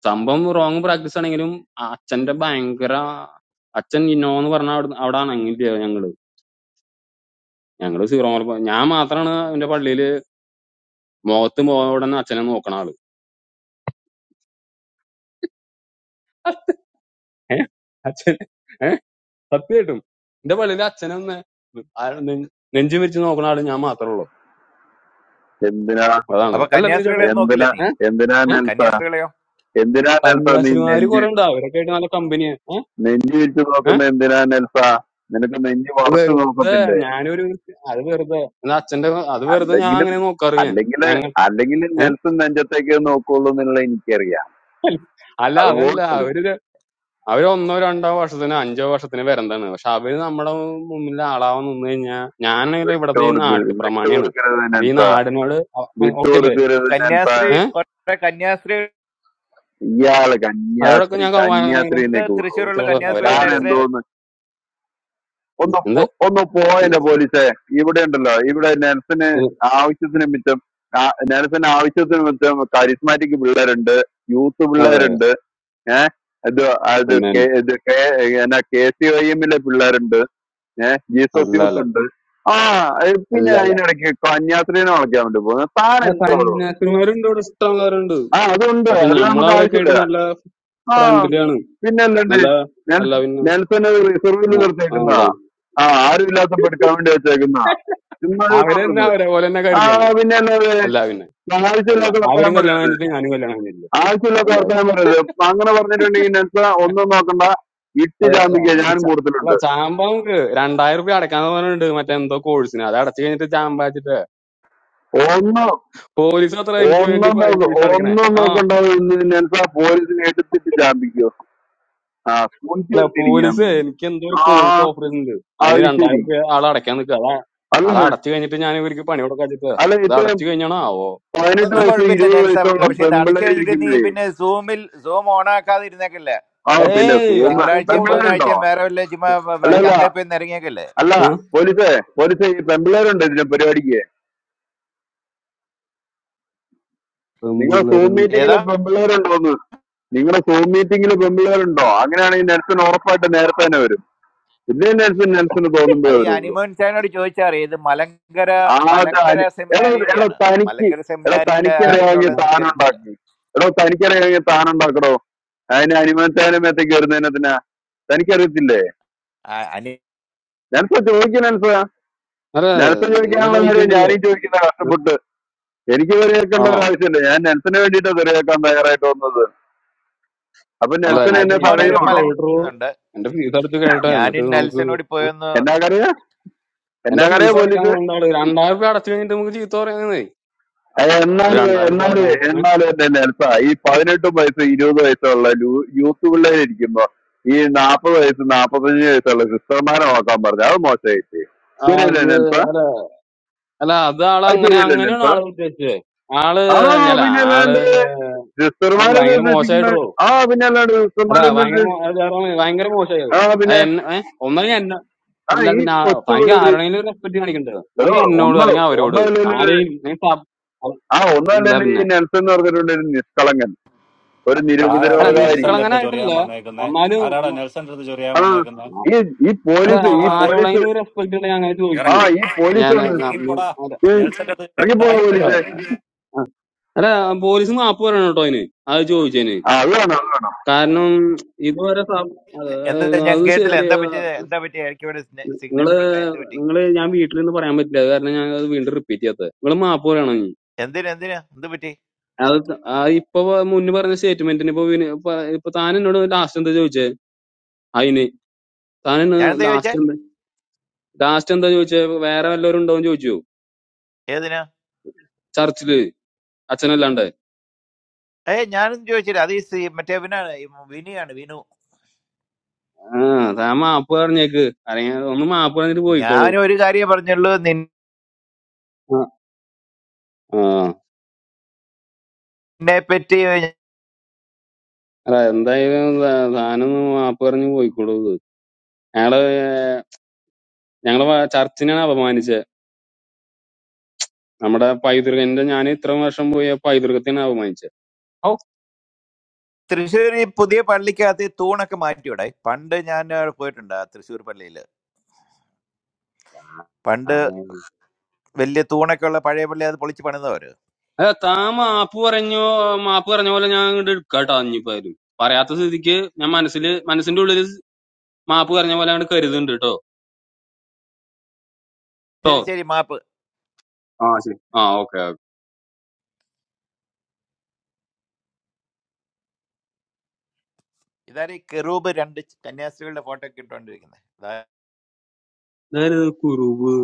Speaker 12: സംഭവം റോങ് പ്രാക്ടീസ് ആണെങ്കിലും ആ അച്ഛന്റെ ഭയങ്കര അച്ഛൻ ഇന്നോ എന്ന് പറഞ്ഞ അവിടെ അവിടെ അണങ്ങില്ല ഞങ്ങള് ഞങ്ങള് സീറോ മലബാർ ഞാൻ മാത്രാണ് എന്റെ പള്ളിയില് മുഖത്ത് മുഖം അച്ഛനെ നോക്കണ ആള് ഏഹ് അച്ഛൻ ഏഹ് സത്യമായിട്ടും എന്റെ പള്ളിയില് അച്ഛനെ ഒന്ന് ആ നെ- നെഞ്ചു വിരിച്ച് നോക്കണ ആള് ഞാൻ മാത്രമേ ഉള്ളൂ
Speaker 22: എന്തിനാ
Speaker 12: അതാണ്
Speaker 21: അപ്പൊ
Speaker 12: അല്ല പിന്നെ
Speaker 21: കന്യാസ്ത്രീകളെ
Speaker 12: ചേട്ടാ
Speaker 21: ഒന്നും നോക്കില്ല
Speaker 22: എന്തിനാ
Speaker 21: നീ
Speaker 12: ഏഹ്
Speaker 22: എന്തിനാ
Speaker 12: ഏഹ്
Speaker 22: നെൽസ
Speaker 21: കന്യാസ്ത്രീകളെയോ
Speaker 22: എന്തിനാ നെൽസ നീ
Speaker 12: കന്യാസിനിമാര്
Speaker 22: നെഞ്ച്
Speaker 12: കുറെ ഉണ്ട് അവരൊക്കെ ആയിട്ട് നല്ല കമ്പനിയാ ഏഹ്
Speaker 22: നെഞ്ച് വിരിച്ചു നോക്കുന്ന
Speaker 12: ഏഹ്
Speaker 22: എന്തിനാ നെൽസ നിനക്ക് നെഞ്ച് വളച്ചു
Speaker 12: വെറുതെ
Speaker 22: നോക്കത്തില്ലേ
Speaker 12: ഞാനൊരു അത് വെറുതെ എന്നാ അച്ഛന്റെ അത് വെറുതെ ഞാൻ
Speaker 22: അല്ലെങ്കിലും
Speaker 12: അങ്ങനെ നോക്കാറ് ഞാൻ
Speaker 22: അല്ലെങ്കിൽ
Speaker 12: ഞങ്ങൾ
Speaker 22: അല്ലെങ്കിൽ
Speaker 12: ഏഹ്
Speaker 22: നെൽസൺ നെഞ്ചത്തേക്ക് നോക്കുള്ളൂ എന്നുള്ള എനിക്കറിയാം
Speaker 12: അല്ല
Speaker 22: അത്
Speaker 12: അതല്ല
Speaker 22: വോട്ട്
Speaker 12: അവര് അവര് ഒന്നോ രണ്ടോ വർഷത്തിന് അഞ്ചോ വർഷത്തിന് വരന്താണ് പക്ഷെ അവര് നമ്മുടെ മുന്നിൽ ആളാവാൻ നിന്ന് കഴിഞ്ഞാൽ ഞാനാണെങ്കിൽ ഇവിടത്തെ ഈ
Speaker 22: വിട്ടുകൊടുക്കരുത്
Speaker 12: നാട്ടുപ്രമാണിയാണ്
Speaker 22: വിട്ടുകൊടുക്കരുത്
Speaker 12: അപ്പൊ ഈ
Speaker 22: നെൽസ
Speaker 12: നാടിനോട് ഓക്കെ അല്ലേ
Speaker 21: ഈ
Speaker 22: വിട്ടുകൊടുക്കരുത് നെൽസ
Speaker 21: കന്യാസ്ത്രീ
Speaker 12: ഏഹ്
Speaker 21: കുറെ കന്യാസ്ത്രീകള്
Speaker 22: ഇയാള്
Speaker 12: അവരോടൊക്കെ
Speaker 22: കന്യാസ്ത്രീ
Speaker 12: ഞാൻ കമാനം
Speaker 22: കന്യാസ്ത്രീനെ കൂടും
Speaker 21: തൃശ്ശൂരുള്ള
Speaker 12: ചോദിച്ചോളൂ.
Speaker 21: കന്യാസ്ത്രീ
Speaker 22: താൻ
Speaker 12: അവരായിട്ട്
Speaker 21: നെൽസിനെ
Speaker 12: അവരെ
Speaker 22: എന്തോ ഒന്ന്
Speaker 12: എന്താ
Speaker 22: പോ- ഒന്ന് പോയല്ലോ
Speaker 12: സന്യാസി
Speaker 22: പോലീസെ ഇവിടെ ഉണ്ടല്ലോ ഇവിടെ നെൽസന്
Speaker 12: ഉം,
Speaker 22: ആവശ്യത്തിന് മിച്ചം ആ- നെൽസന് ആവശ്യത്തിന് മിച്ചം കരിസ്മാറ്റിക് പിള്ളേരുണ്ട് യൂത്ത്
Speaker 12: അതെ
Speaker 22: പിള്ളേരുണ്ട് ഏഹ് ഇത് അത്
Speaker 12: പിന്നെ
Speaker 22: കെ ഇത് കെ എന്നാ കെ സി ഐ എമ്മിലെ പിള്ളേരുണ്ട് ഏഹ് ജീസസ്
Speaker 12: അല്ല
Speaker 22: യൂത്ത്
Speaker 12: അല്ല
Speaker 22: ഉണ്ട് ആ ഏഹ് പിന്നെ
Speaker 12: അല്ല അല്ല
Speaker 22: അതിനിടയ്ക്ക് കന്യാസ്ത്രീനെ വളയ്ക്കാൻ വേണ്ടി പോകുന്നു താൻ
Speaker 12: ആ
Speaker 22: എന്തോ
Speaker 12: സന്യാസിമാരുണ്ട് ഇവിടെ ഇഷ്ടമുള്ളവരുണ്ട്
Speaker 22: ആ അതുണ്ട്
Speaker 12: പക്ഷെ
Speaker 22: അത്
Speaker 12: നമ്മൾ
Speaker 22: നമുക്ക്
Speaker 12: അവരൊക്കെ ആയിട്ട്
Speaker 22: ആവശ്യമില്ല
Speaker 12: നല്ല
Speaker 22: ആ
Speaker 12: ഫ്രണ്ട്ലിയാണ്
Speaker 22: പിന്നെ അല്ലണ്ട്
Speaker 12: നല്ല നല്ല
Speaker 22: നെൽസ-
Speaker 12: പിന്നെ
Speaker 22: നെൽസന് റിസർവിൽ
Speaker 12: ആ, ആ, അല്ല.
Speaker 22: നിർത്തിയേക്കുന്നതാ ആ ആരും ഇല്ലാത്തപ്പോ എടുക്കാൻ വേണ്ടി വെച്ചേക്കുന്നതാ ചുമ്മാ ഇത് തുടരുന്നു
Speaker 12: അവരെന്നെ അവരെ പോലെ തന്നെ
Speaker 22: ആ
Speaker 12: കരുതിയാണ്
Speaker 22: പിന്നെ എന്നത്
Speaker 12: എല്ലാ പിന്നെ അല്ല
Speaker 22: ആവശ്യമില്ലാത്ത വർത്തമാനം
Speaker 12: അവരും കല്യാണം
Speaker 22: പറയരുത്
Speaker 12: കഴിഞ്ഞിട്ട് ഞാനും കല്യാണം കഴിഞ്ഞില്ല
Speaker 22: ആവശ്യമില്ലാത്ത വർത്തമാനം പറയരുത് അങ്ങനെ പറഞ്ഞിട്ടുണ്ടെങ്കിൽ നെൻസ ഒന്നും നോക്കണ്ട ഇട്ട്
Speaker 12: അതെ അല്ല
Speaker 22: ചാമ്പിക്ക
Speaker 12: നമുക്ക്
Speaker 22: ഞാൻ
Speaker 12: ച- അല്ല,
Speaker 22: കൂടുതലുണ്ട്
Speaker 12: ചാമ്പ നമുക്ക് രണ്ടായിരം റുപ്യ അടക്കാന്ന് പറഞ്ഞിട്ടുണ്ട് മറ്റേ എന്തോ കോഴ്സിന് അത് അടച്ചു കഴിഞ്ഞിട്ട് ചാമ്പ വെച്ചിട്ട്
Speaker 22: ഒന്ന്
Speaker 12: പോലീസ് അത്ര എനിക്ക് വേണ്ടി
Speaker 22: ഒന്നും
Speaker 12: ഫൈൻ
Speaker 22: നോക്ക
Speaker 12: ഫീസ് അടക്കണേ
Speaker 22: ഒന്നും
Speaker 12: ആ
Speaker 22: നോക്കണ്ട ഇന്ന് നെൻസ പോലീസിനെ എടുത്തിട്ട് ചാമ്പിക്കോ ആ
Speaker 12: അല്ല പോലീസ്
Speaker 22: കുഞ്ചിരിക്കാന്ന്
Speaker 12: എനിക്ക് എന്തോ ഒരു
Speaker 22: ആ
Speaker 12: കോഴ്സ് ഓഫർ ചെയ്യുന്നുണ്ട് അതിന്
Speaker 22: അത്
Speaker 12: രണ്ടായിരം
Speaker 22: ശരി
Speaker 12: റുപ്യ ആൾ അടക്കാൻ നിൽക്കുക അതാ
Speaker 22: അല്ല
Speaker 12: അത് അടച്ചു കഴിഞ്ഞിട്ട് ഞാൻ ഇവർക്ക് പണി കൊടുക്കാച്ചിട്ട്
Speaker 22: അല്ല
Speaker 12: അത്
Speaker 22: ഇത്രയും
Speaker 12: അടച്ചു കഴിഞ്ഞാണോ ആവോ
Speaker 22: പതിനെട്ട്
Speaker 12: ഏ?
Speaker 21: അതൊന്നും
Speaker 22: വയസ്സ്
Speaker 21: കുഴപ്പമില്ല
Speaker 22: ഇരുപത്
Speaker 21: നെൽസ
Speaker 22: വയസ്സുള്ള
Speaker 12: ഏ?
Speaker 21: പക്ഷെ ഇത് അടിച്ചു
Speaker 22: പെമ്പിള്ളേര്
Speaker 21: കഴിഞ്ഞിട്ട് നീ
Speaker 22: ഇരിക്കുമ്പോഴേ
Speaker 21: പിന്നെ സൂമിൽ സൂം ഓൺ ആക്കാതെ ഇരുന്നേക്കില്ല
Speaker 22: ആ പിന്നെ
Speaker 12: ഏയ്
Speaker 22: സൂമ
Speaker 12: അത്
Speaker 21: തിങ്കളാഴ്ചയും
Speaker 12: പോണാക്കും
Speaker 22: പെമ്പിള്ളേരുണ്ടോ
Speaker 21: ബുധനാഴ്ചയും വേറെ വല്ല ചുമ്മാ വ-
Speaker 22: അല്ല
Speaker 21: വ-
Speaker 12: ഏ?
Speaker 22: അല്ല
Speaker 21: ചന്തയിൽ പോയി നിരങ്ങിയേക്കല്ലേ
Speaker 22: അല്ല
Speaker 12: ആ?
Speaker 22: പോലീസേ പോലീസേ ഈ പെമ്പിള്ളേരുണ്ടോ ഇതിന്റെ പരിപാടിക്ക് നിങ്ങൾ സൂം
Speaker 12: പെമ്പിള്ളേരുണ്ട്
Speaker 22: മീറ്റിംഗിൽ
Speaker 21: ഏതാ
Speaker 22: പെമ്പിള്ളേരുണ്ടോന്ന് നിങ്ങളുടെ സൂം മീറ്റിംഗിൽ പെമ്പിള്ളേരുണ്ടോ അങ്ങനെയാണെങ്കിൽ നെൽസൺ ഉറപ്പായിട്ട് നേരത്തെ തന്നെ വരും ഇല്ലേ നെൽസൺ നെൽസന് തോന്നുമ്പോ
Speaker 21: അത് ഈ
Speaker 22: വരുള്ളൂ
Speaker 21: അനിമോൻ ചായനോട് ചോദിച്ചാൽ അറിയാം, ഇത് മലങ്കര
Speaker 22: ആദ്യം
Speaker 21: മലങ്കര
Speaker 22: അനി- എടോ എടോ
Speaker 21: സെമിനാരിയുടെയാണ്
Speaker 22: തനിക്ക്
Speaker 21: മലങ്കര
Speaker 22: എടോ
Speaker 21: സെമിനാരിയിൽ
Speaker 22: തനിക്ക്
Speaker 12: ഏ?
Speaker 22: അറിയാമെങ്കിൽ
Speaker 12: മ-
Speaker 21: ആരൊക്കെയുള്ളതെന്ന് എനിക്കറിയത്തില്ല
Speaker 22: താനുണ്ടാക്കി എടോ തനിക്ക് അറിയാമെങ്കിൽ താനുണ്ടാക്കടോ അതിന് അനുമാനത്തേനും മേത്തേക്ക് വരുന്നതിനെത്തിനാ തനിക്കറിയത്തില്ലേ
Speaker 21: ആ- അനിമ-
Speaker 22: നെൽസൺ ചോദിക്കും നെൽസ
Speaker 12: അല്ല
Speaker 22: നെൽസൺ
Speaker 12: നിങ്ങൾ
Speaker 22: ചോദിക്കാനുള്ള കാര്യം
Speaker 12: ചോദിക്കണ്ടല്ലോ
Speaker 22: ഞാനീ ചോദിക്കുന്ന
Speaker 12: ഏ?
Speaker 22: കഷ്ടപ്പെട്ട് എനിക്ക് തെറിയേക്കേണ്ട
Speaker 12: ആണോ
Speaker 22: ഒരു ആവശ്യമില്ല ഞാൻ നെൽസന് വേണ്ടിയിട്ടാണ് തെറിയേക്കാൻ തയ്യാറായിട്ട് വന്നത് അപ്പൊ
Speaker 12: അല്ല
Speaker 22: നെൽസൺ
Speaker 12: എന്റെ
Speaker 22: എന്നെ
Speaker 12: ഫീസ്
Speaker 21: അനിമോൻ ഒരു
Speaker 12: അടച്ച്
Speaker 22: തടയുവാണോ
Speaker 12: കഴിയട്ടോ
Speaker 21: മലങ്കുണ്ട്
Speaker 12: എന്റെ ഫീസ് അടച്ച് കഴിയട്ടെ എന്നിട്ട്
Speaker 21: ഞാനും നെൽസനോട്
Speaker 12: നമുക്ക്
Speaker 21: പോയൊന്ന്
Speaker 22: എന്നാ കറിയാ
Speaker 12: എന്റെ
Speaker 22: എന്നാ കറിയാ
Speaker 12: ഫീസ്
Speaker 22: പോലീസ്
Speaker 12: അടക്കാൻ കൊണ്ടാള് രണ്ടായിരം രൂപ അടച്ചു കഴിഞ്ഞിട്ട് നമുക്ക് ചീത്ത പറയുന്നേ അത്
Speaker 22: എന്നാല്
Speaker 12: രണ്ടായിരം രൂപ
Speaker 22: എന്നാല്
Speaker 12: അടക്കണം ഏ?
Speaker 22: എന്നാല് എന്റെ നെൽസ ഈ പതിനെട്ട് വയസ്സ് ഇരുപത് വയസ്സുള്ള ലൂ- യൂത്ത് പിള്ളേരിക്കുമ്പോ ഈ നാപ്പത് വയസ്സ് നാപ്പത്തഞ്ച് വയസ്സുള്ള സിസ്റ്റർമാരെ നോക്കാൻ പറഞ്ഞു അത് മോശമായിട്ട് ശരിയല്ലേ
Speaker 12: അത്
Speaker 22: നെൽസ
Speaker 12: അല്ല അല്ല, അത് ആള്
Speaker 22: അത്
Speaker 12: അങ്ങനെ
Speaker 22: ശരിയല്ലേ
Speaker 12: അങ്ങനെയാണ്
Speaker 22: നെൽസ
Speaker 12: ആള് ഉദ്ദേശിച്ചത് ആള്
Speaker 22: ആ
Speaker 12: അല്ല
Speaker 22: പിന്നെ
Speaker 12: ആള്
Speaker 22: അല്ലാണ്ട്
Speaker 12: അത്
Speaker 22: സിസ്റ്റർമാരെ
Speaker 12: ഭയങ്കര
Speaker 22: നിർദ്ദേശിക്കുന്ന
Speaker 12: മോശമായിട്ടോ
Speaker 22: ആ പിന്നെ അല്ലാണ്ട്
Speaker 12: അല്ല
Speaker 22: സിസ്റ്റർമാരെ
Speaker 12: ഭയങ്കര
Speaker 22: നിർദ്ദേശിക്കുന്ന
Speaker 12: മോ- അത് വേറെ ഒന്നും- ഭയങ്കര മോശമായത്
Speaker 22: ആ പിന്നെ
Speaker 12: എന്നെ ഏ? ഒന്നല്ലെങ്കിൽ എന്നെ
Speaker 22: ആ
Speaker 12: അല്ല
Speaker 22: ഈ
Speaker 12: പിന്നെ ആ-
Speaker 22: കൊച്ചു
Speaker 12: തനിക്ക് ആരോടെങ്കിലും റെസ്പെക്ട് കാണിക്കണ്ടത്
Speaker 22: എടോ
Speaker 12: ഒന്നെങ്കിൽ എന്നോട്
Speaker 22: ഒന്ന്
Speaker 12: അല്ലെങ്കിൽ അവരോട്
Speaker 22: ഒന്നല്ല
Speaker 12: ആരെയും നീ സബ്- അല്ല
Speaker 22: ആ ഒന്നല്ല
Speaker 12: അല്ല
Speaker 22: ഈ
Speaker 12: പിന്നെ
Speaker 22: നെൽസൺ എന്ന് പറഞ്ഞിട്ടുണ്ട് ഒരു നിഷ്കളങ്കൻ ഒരു
Speaker 7: ആരാടാ
Speaker 12: അല്ല
Speaker 7: ഈ
Speaker 22: നിരുപദ്രവകാരി
Speaker 7: നെൽസന്റെ അടുത്ത്
Speaker 12: നിഷ്കളങ്കനായിട്ടില്ല
Speaker 7: ചൊറിയാൻ വന്നേക്കുന്നേ
Speaker 12: എന്നാലും
Speaker 7: ആരാടാ നെൽസന്റെ അടുത്ത് ചൊറിയാൻ
Speaker 22: ആ
Speaker 7: വന്നേക്കുന്നേ
Speaker 22: ഈ ഈ
Speaker 12: അല്ല
Speaker 7: ഇറക്കി
Speaker 22: പോലീസ്
Speaker 7: വിടാ
Speaker 22: ഈ
Speaker 7: അവനെ
Speaker 22: പോലീസ്
Speaker 12: ആരോടെങ്കിലും റെസ്പെക്ട് ഉണ്ടെങ്കിൽ അങ്ങനെ
Speaker 22: ആ
Speaker 12: ചോദിക്കൂ
Speaker 7: ഇറക്കി
Speaker 22: ഈ
Speaker 7: വിടാ.
Speaker 22: പോലീസ്
Speaker 12: ഞാൻ
Speaker 22: വന്ന്
Speaker 12: ഞാൻ- നീ-
Speaker 7: ഇറങ്ങിപ്പോടാ
Speaker 22: ഏയ്
Speaker 7: നെൽസന്റെ അടുത്ത് ചൊറിയാൻ
Speaker 22: ഇറങ്ങിപ്പോ
Speaker 7: ഇവിടെ
Speaker 12: അല്ല.
Speaker 22: പോലീസെ
Speaker 12: അല്ല പോലീസ് മാപ്പ് പറയണം കേട്ടോ അതിന് അത് ചോദിച്ചതിന്
Speaker 22: ആ അത് വേണം അത് വേണം
Speaker 12: കാരണം ഇതുവരെ സം- അത്
Speaker 21: എന്താ ഞാൻ
Speaker 12: അത്
Speaker 21: കേട്ടില്ല
Speaker 12: ശരി
Speaker 21: എന്താ പറ്റിയത് എന്താ പറ്റി എനിക്ക് ഇവിടെ സിഗ്നൽ
Speaker 12: നിങ്ങള്
Speaker 21: പ്രശ്നം എന്ത് പറ്റി
Speaker 12: നിങ്ങള് ഞാൻ വീട്ടിൽ നിന്ന് പറയാൻ പറ്റില്ല അത് കാരണം ഞാൻ അത് വീണ്ടും റിപ്പീറ്റ് ചെയ്യാത്തത് നിങ്ങള് മാപ്പ് പറയണം ഇനി.
Speaker 21: എന്തിനു എന്തിനു എന്ത് പറ്റി
Speaker 12: അത് ത- ആ ഇപ്പൊ മുന്നേ പറഞ്ഞ സ്റ്റേറ്റ്മെന്റിന് ഇപ്പൊ വിനി- ഇപ്പൊ ഇപ്പൊ താൻ എന്നോട് ലാസ്റ്റ് എന്താ ചോദിച്ചേ അതിന് താൻ
Speaker 21: ഞാൻ എന്താ ചോദിച്ചേ
Speaker 12: ലാസ്റ്റ് എന്താ ലാസ്റ്റ് എന്താ ചോദിച്ചേ വേറെ വല്ലവരും ഉണ്ടോ എന്ന് ചോദിച്ചു
Speaker 21: ഏതിനാ
Speaker 12: ചർച്ചില് അച്ഛനല്ലാണ്ട്
Speaker 21: ഏ ഞാനൊന്നും ചോദിച്ചില്ല അത് ഈ സി- മറ്റേ ഇവനാണ് ഈ വിനിയാണ് വിനു
Speaker 12: ആ താൻ മാപ്പ് പറഞ്ഞേക്ക് അല്ലെങ്കിൽ ഒന്ന് മാപ്പ് പറഞ്ഞിട്ട് പോയിക്കോളൂ
Speaker 21: ഞാൻ ഒരു കാര്യം പറഞ്ഞുള്ളൂ
Speaker 12: ആ
Speaker 21: എന്നെ പറ്റി
Speaker 12: അല്ല എന്തായാലും താ- താനൊന്ന് മാപ്പ് പറഞ്ഞു പോയിക്കോളൂ ഞങ്ങള് ഞങ്ങള് ഞങ്ങളെ വ- ചർച്ചിനെയാണ് അപമാനിച്ചത് നമ്മുടെ പൈതൃകന്റെ ഞാൻ ഇത്ര വർഷം പോയ പൈതൃകത്തിനാണ് അപമാനിച്ചത് ഔ
Speaker 21: തൃശ്ശൂർ ഈ പുതിയ പള്ളിക്കകത്ത് ഈ തൂണൊക്കെ മാറ്റിവിടെ പണ്ട് ഞാൻ അവിടെ പോയിട്ടുണ്ട് ആ തൃശ്ശൂർ പള്ളിയിൽ പണ്ട്
Speaker 12: താനെ-
Speaker 21: വലിയ തൂണൊക്കെ ഉള്ള പഴയ പള്ളി അത് പൊളിച്ച് പണിതവര്
Speaker 12: അല്ല താൻ മാപ്പ് പറഞ്ഞു മാപ്പ് പറഞ്ഞ പോലെ ഞാൻ ഇങ്ങോട്ട് എടുക്കാട്ടോ അഞ്ഞിപ്പായാലും പറയാത്ത സ്ഥിതിക്ക് ഞാൻ മനസ്സില് മനസ്സിന്റെ ഉള്ളില് മാപ്പ് പറഞ്ഞ പോലെ അങ്ങോട്ട് കരുതുന്നുണ്ട് കേട്ടോ കേട്ടോ
Speaker 21: ശരി ശരി മാപ്പ്
Speaker 12: ആ ശരി ആ ഓക്കെ
Speaker 21: ഇതാരും ഈ കെറൂബ് രണ്ട് ച- കന്യാസ്ത്രീകളുടെ ഫോട്ടോ ഒക്കെ ഇട്ടുകൊണ്ടിരിക്കുന്നത്
Speaker 12: ഇതാരത് കുറുബ്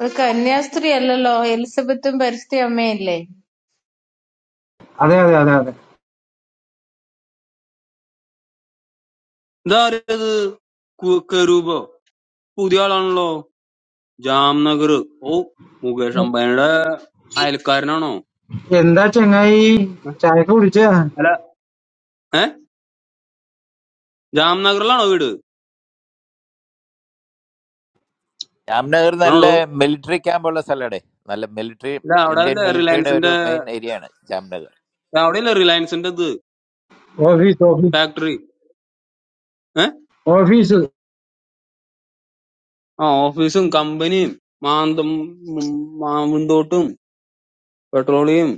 Speaker 13: ഒരു കന്യാസ്ത്രീ അല്ലല്ലോ എലിസബത്തും പരിശുദ്ധ അമ്മയല്ലേ
Speaker 23: അതെ അതെ അതെ അതെ
Speaker 12: ഇതാരത് കു- കെറൂബോ പുതിയ ആളാണല്ലോ ജാംനഗർ ഓ മുകേഷ് അംബാനിയുടെ അയൽക്കാരനാണോ
Speaker 23: എന്താ ചങ്ങായി
Speaker 12: എഹ്,
Speaker 23: ചായക്ക് കുടിച്ച
Speaker 12: അല്ല ഏ ജാംനഗറിലാണോ വീട്
Speaker 21: ജാംനഗർ നല്ല
Speaker 12: ആണോടോ
Speaker 21: മിലിറ്ററി ക്യാമ്പുള്ള സ്ഥലമാണ് നല്ല മിലിറ്ററി
Speaker 12: ഇല്ല അവിടെ
Speaker 21: ഇന്ത്യൻ
Speaker 12: അല്ലേ
Speaker 21: മിലിറ്ററിയുടെ ഒരു
Speaker 12: റിലയൻസിന്റെ
Speaker 21: മെയിൻ ഏരിയ ആണ് ജാംനഗർ
Speaker 12: അവിടെ അല്ലേ റിലയൻസിന്റെ ഇത്
Speaker 23: ഓഫീസ് ഓഫീസ്
Speaker 12: ഫാക്ടറി ഏ
Speaker 23: ഓഫീസ്
Speaker 12: ആ ഓഫീസും കമ്പനിയും മാന്തം ഉം, മാവിന്തോട്ടും പെട്രോളിയം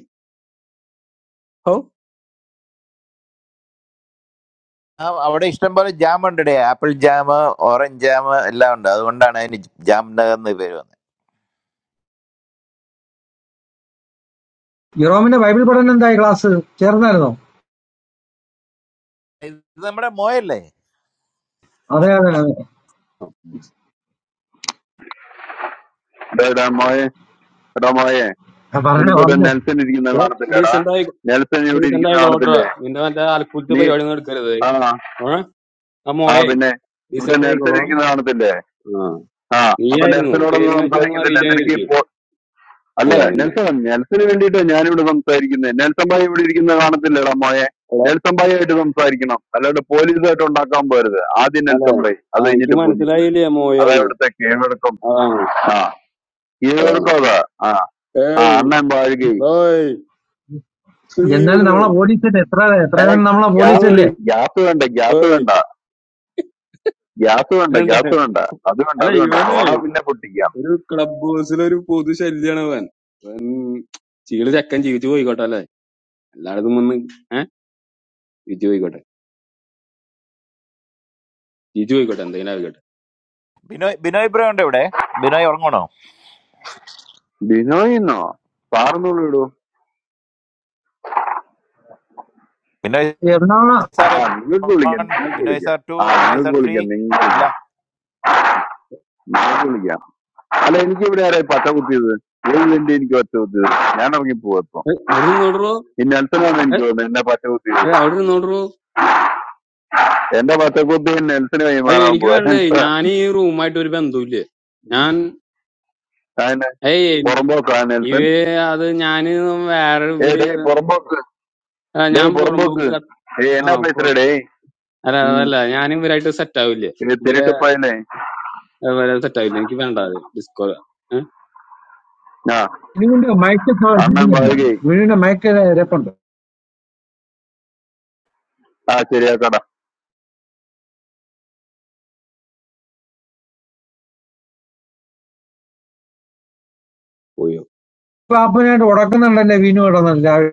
Speaker 12: ഓ
Speaker 21: ആ അവിടെ ഇഷ്ടം പോലെ ജാം ഉണ്ട് ആപ്പിൾ ജാം ഓറഞ്ച് ജാം എല്ലാം ഉണ്ട് അതുകൊണ്ടാണ് അതിന് ജാംനഗർ എന്ന് പേര് വന്നത്
Speaker 23: യൂറോമിന്റെ ബൈബിൾ പഠനം എന്തായി ക്ലാസ് ചേർന്നായിരുന്നോ
Speaker 21: ഇത് നമ്മുടെ മോയല്ലേ
Speaker 23: അതെ അതെ അതെ
Speaker 22: എടാ എടാ മോയെ എടാ മോയെ
Speaker 23: ആ, പറഞ്ഞോ
Speaker 22: നിനക്കൊരു
Speaker 23: പറഞ്ഞോ
Speaker 22: നെൽസൺ ഇരിക്കുന്ന കാണത്തില്ലടാ
Speaker 12: ഡീസെന്റ് ആയി
Speaker 22: നെൽസൺ ഇവിടെ
Speaker 12: ഡീസെന്റ്
Speaker 22: ഇരിക്കുന്ന
Speaker 12: ആയിക്കോട്ടെ
Speaker 22: കാണത്തില്ലേ
Speaker 12: നിന്റെ മറ്റേ അൽക്കുലത്തെ
Speaker 22: നീ
Speaker 12: പരിപാടി ഒന്നും എടുക്കരുത്
Speaker 22: ആ
Speaker 12: ഓ ആ
Speaker 22: ആ
Speaker 12: മോയെ
Speaker 22: പിന്നെ ഇവിടെ
Speaker 12: ഡീസെന്റ്
Speaker 22: നെൽസൺ
Speaker 12: ആയിക്കോളോ
Speaker 22: ഇരിക്കുന്ന കാണത്തില്ലേ
Speaker 12: ആ
Speaker 22: ആ അപ്പൊ
Speaker 12: നീയായിരുന്നു പേര്
Speaker 22: നെൽസനോടൊന്നും
Speaker 12: മാറ്റി ഒന്നും
Speaker 22: സംസാരിക്കത്തില്ല
Speaker 12: അറിയില്ല
Speaker 22: നിനക്ക്
Speaker 12: വിചാരിച്ചു
Speaker 22: ഇപ്പോ അല്ല
Speaker 12: അല്ല പിന്നെ
Speaker 22: നെൽസൺ നെൽസന് വേണ്ടിയിട്ടാ ഞാനിവിടെ സംസാരിക്കുന്നത് നെൽസൺ ഭായി ഇവിടെ ഇരിക്കുന്ന കാണത്തില്ലടാ മോയെ നെൽസൺ ഭായി ആയിട്ട് സംസാരിക്കണം അല്ലാണ്ട് പോലീസായിട്ട് ഉണ്ടാക്കാൻ പോരുത് ആദ്യം
Speaker 12: അല്ലെ
Speaker 22: നെൽസൺ ഭായി
Speaker 12: ആ
Speaker 22: അത്
Speaker 12: എനിക്ക്
Speaker 22: കഴിഞ്ഞിട്ട് പോലീസ്
Speaker 12: മനസ്സിലായില്ലേ
Speaker 22: അതാ
Speaker 12: മോയാന്ന്
Speaker 22: ഇവിടുത്തെ കീഴ്വഴക്കം
Speaker 12: അതാണ്
Speaker 22: ആ
Speaker 12: അതാണ്
Speaker 22: കീഴ്വഴക്കം അതാ ആ
Speaker 12: ഏയ്
Speaker 22: അണ്ണൻ വാഴുകയും
Speaker 12: ഓയ് ശ്രീ
Speaker 23: എന്നാലും
Speaker 12: വിടുവേ
Speaker 23: നമ്മളെ പോലീസല്ലേ എത്ര
Speaker 22: ഏ
Speaker 23: എത്രയാലും നമ്മളെ
Speaker 22: ഗ്യാസ്
Speaker 12: ഓയ്
Speaker 23: പോലീസല്ലേ
Speaker 22: ഗ്യാസ് വേണ്ട ഗ്യാസ്
Speaker 12: ഓയ്
Speaker 22: വേണ്ട ഗ്യാസ് വേണ്ട
Speaker 12: വേണ്ട
Speaker 22: ഗ്യാസ് വേണ്ട അത് വേണ്ട
Speaker 12: അല്ല
Speaker 22: അത് വേണ്ട
Speaker 12: ഇവനെ
Speaker 22: സോഡ പിന്നെ പൊട്ടിക്കാം
Speaker 12: ഒരു ക്ലബ് ഹൗസിലെ ഒരു പൊതു ശല്യാണ് അവൻ അവൻ ചീള് ചക്കൻ ജീവിച്ചു പോയിക്കോട്ടെ അല്ലെ എല്ലായിടത്തും വന്ന് ഏഹ് ജീവിച്ചു പോയിക്കോട്ടെ ജീവിച്ചു പോയിക്കോട്ടെ എന്തെങ്കിലും ആയിക്കോട്ടെ
Speaker 21: ബിനോയ് ബിനോയ് ബ്രോ ഉണ്ട് ഇവിടെ ബിനോയ് ഉറങ്ങണോ
Speaker 22: ബിനോയിന്നോ പാർന്നുള്ളൂ ഇടൂ
Speaker 21: ബിനോയ്
Speaker 23: എറണാകുളം
Speaker 22: ആ
Speaker 21: സാർ
Speaker 22: നിങ്ങൾക്ക് വിളിക്കാം
Speaker 21: one,
Speaker 22: നിങ്ങൾക്ക്
Speaker 21: ബിനോയ്
Speaker 22: വിളിക്കാം
Speaker 21: സാർ ടു
Speaker 22: ആ
Speaker 21: ബിനോയ്
Speaker 22: നിങ്ങൾക്ക്
Speaker 21: സാർ ത്രീ
Speaker 22: വിളിക്കാം നിങ്ങൾക്ക്
Speaker 21: ഇല്ല
Speaker 22: വിളിക്കാം നിങ്ങൾക്ക് വിളിക്കാം അല്ല എനിക്ക് ഇവിടെ ആരായി പച്ച കുത്തിയത് ഏതിന്റെ എനിക്ക് പച്ച കുത്തിയത് ഞാൻ ഇറങ്ങിപ്പോവാ ഇപ്പം
Speaker 12: ഏയ്, അവിടെ നിന്ന് നോട്ടറോ
Speaker 22: ഈ നെൽസനാണ് എനിക്ക് തോന്നുന്നത് എന്നെ പച്ച കുത്തിയത്
Speaker 12: അവിടെ നിന്ന് നോട്ടറോ
Speaker 22: എന്റെ പച്ച കുത്തി നെൽസന്
Speaker 12: അയ്യോ
Speaker 22: കൈമാറാൻ
Speaker 12: എനിക്ക്
Speaker 22: പോവാ
Speaker 12: വേണ്ടേ
Speaker 22: നെൽസൺ
Speaker 12: ഞാൻ ഈ റൂമായിട്ട് ഒരു ബന്ധമില്ല ഞാൻ
Speaker 22: അതിന്
Speaker 12: ഏയ്
Speaker 22: പുറമ്പോക്കാ നെൽസൺ
Speaker 12: ഇവര് അത് ഞാന് വേറെ
Speaker 22: ഏ
Speaker 12: ഇവര്
Speaker 22: ഡേ പുറമ്പോക്ക്
Speaker 12: ആ,
Speaker 22: ഡേ
Speaker 12: ഞാൻ
Speaker 22: പുറമ്പോക്ക്
Speaker 12: പുറമ്പോക്ക്
Speaker 22: ഏ
Speaker 12: ആ
Speaker 22: എന്നാ
Speaker 12: അപ്പൊ
Speaker 22: പേசுற ഡേ
Speaker 12: അല്ല
Speaker 22: ഉം.
Speaker 12: അതല്ല ഞാൻ ഇവരായിട്ട് സെറ്റ് ആവില്ലേ
Speaker 22: ഇത്
Speaker 12: ഇവരെ
Speaker 22: തിരുട്ടപ്പായനെ
Speaker 12: ഇവരെ സെറ്റ് ആവില്ല എനിക്ക് വേണ്ട അത് ഡിസ്കോ ഏഹ്
Speaker 22: ആ
Speaker 23: വിനുവിന്റെ മയക്ക്
Speaker 22: അണ്ണൻ
Speaker 23: ശ്രദ്ധിക്കുന്നില്ല
Speaker 22: മാളികേ
Speaker 23: വിനുവിന്റെ മയക്ക് രപ്പുണ്ട്
Speaker 22: ആ ശരിയാക്കടാ
Speaker 12: പോയോ
Speaker 23: പാപ്പനായിട്ട് ഉടക്കുന്നുണ്ടല്ലേ വിനു കിടന്നത് രാവിലെ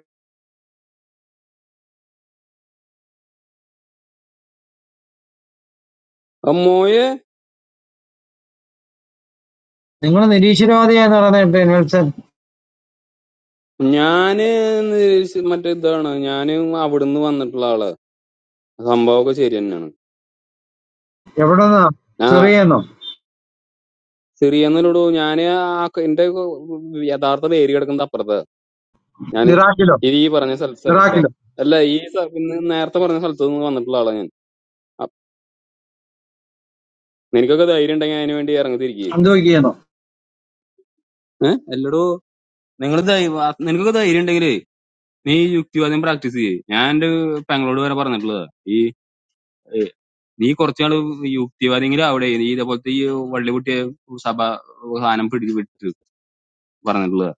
Speaker 12: ആ മോയെ
Speaker 23: നിങ്ങൾ നിരീശ്വരവാദിയാന്ന് പറഞ്ഞിട്ട് നെൽസൺ
Speaker 12: ഞാന് ന്ന് സ് മറ്റേ ഇതാണ് ഞാന് അവിടുന്ന് വന്നിട്ടുള്ള ആള് സംഭവമൊക്കെ ശരി തന്നെയാണ്
Speaker 23: എവിടെ നിന്നാ
Speaker 12: ആ
Speaker 23: സിറിയെന്നോ
Speaker 12: സിറിയെന്നല്ലോടോ ഞാന് ആ ക- എന്റെ ക- യഥാർത്ഥ പേര് കിടക്കുന്നത് അപ്പുറത്ത് ഞാൻ
Speaker 23: ഇറാഖിലോ
Speaker 12: ഈ പറഞ്ഞ സ്ഥല സ്ഥലത്ത്
Speaker 23: ഇറാഖിലോ
Speaker 12: അല്ല ഈ സ- ഇന്ന് നേരത്തെ പറഞ്ഞ സ്ഥലത്ത് നിന്ന് വന്നിട്ടുള്ള ആളാ ഞാൻ അ- നിനക്കൊക്കെ ധൈര്യം ഉണ്ടെങ്കിൽ അതിനു വേണ്ടി ഇറങ്ങി തിരിക്കുക
Speaker 23: അന്തോക്കിയെന്നോ
Speaker 12: ഏഹ് അല്ലടോ നിങ്ങൾ നിനക്കൊക്കെ ധൈര്യം ഉണ്ടെങ്കിലേ നീ ഈ യുക്തിവാദം പ്രാക്ടീസ് ചെയ്യേ ഞാൻ എന്റെ പെങ്ങളോട് വരെ പറഞ്ഞിട്ടുള്ളതാ ഈ ഏ, നീ കുറച്ചാള് യുക്തിവാദിങ്കിലും അവിടെ നീ ഇതേപോലത്തെ ഈ വള്ളി കുട്ടിയെ സഭ സാധനം പിടിച്ച് വിട്ട് പറഞ്ഞിട്ടുള്ളതാ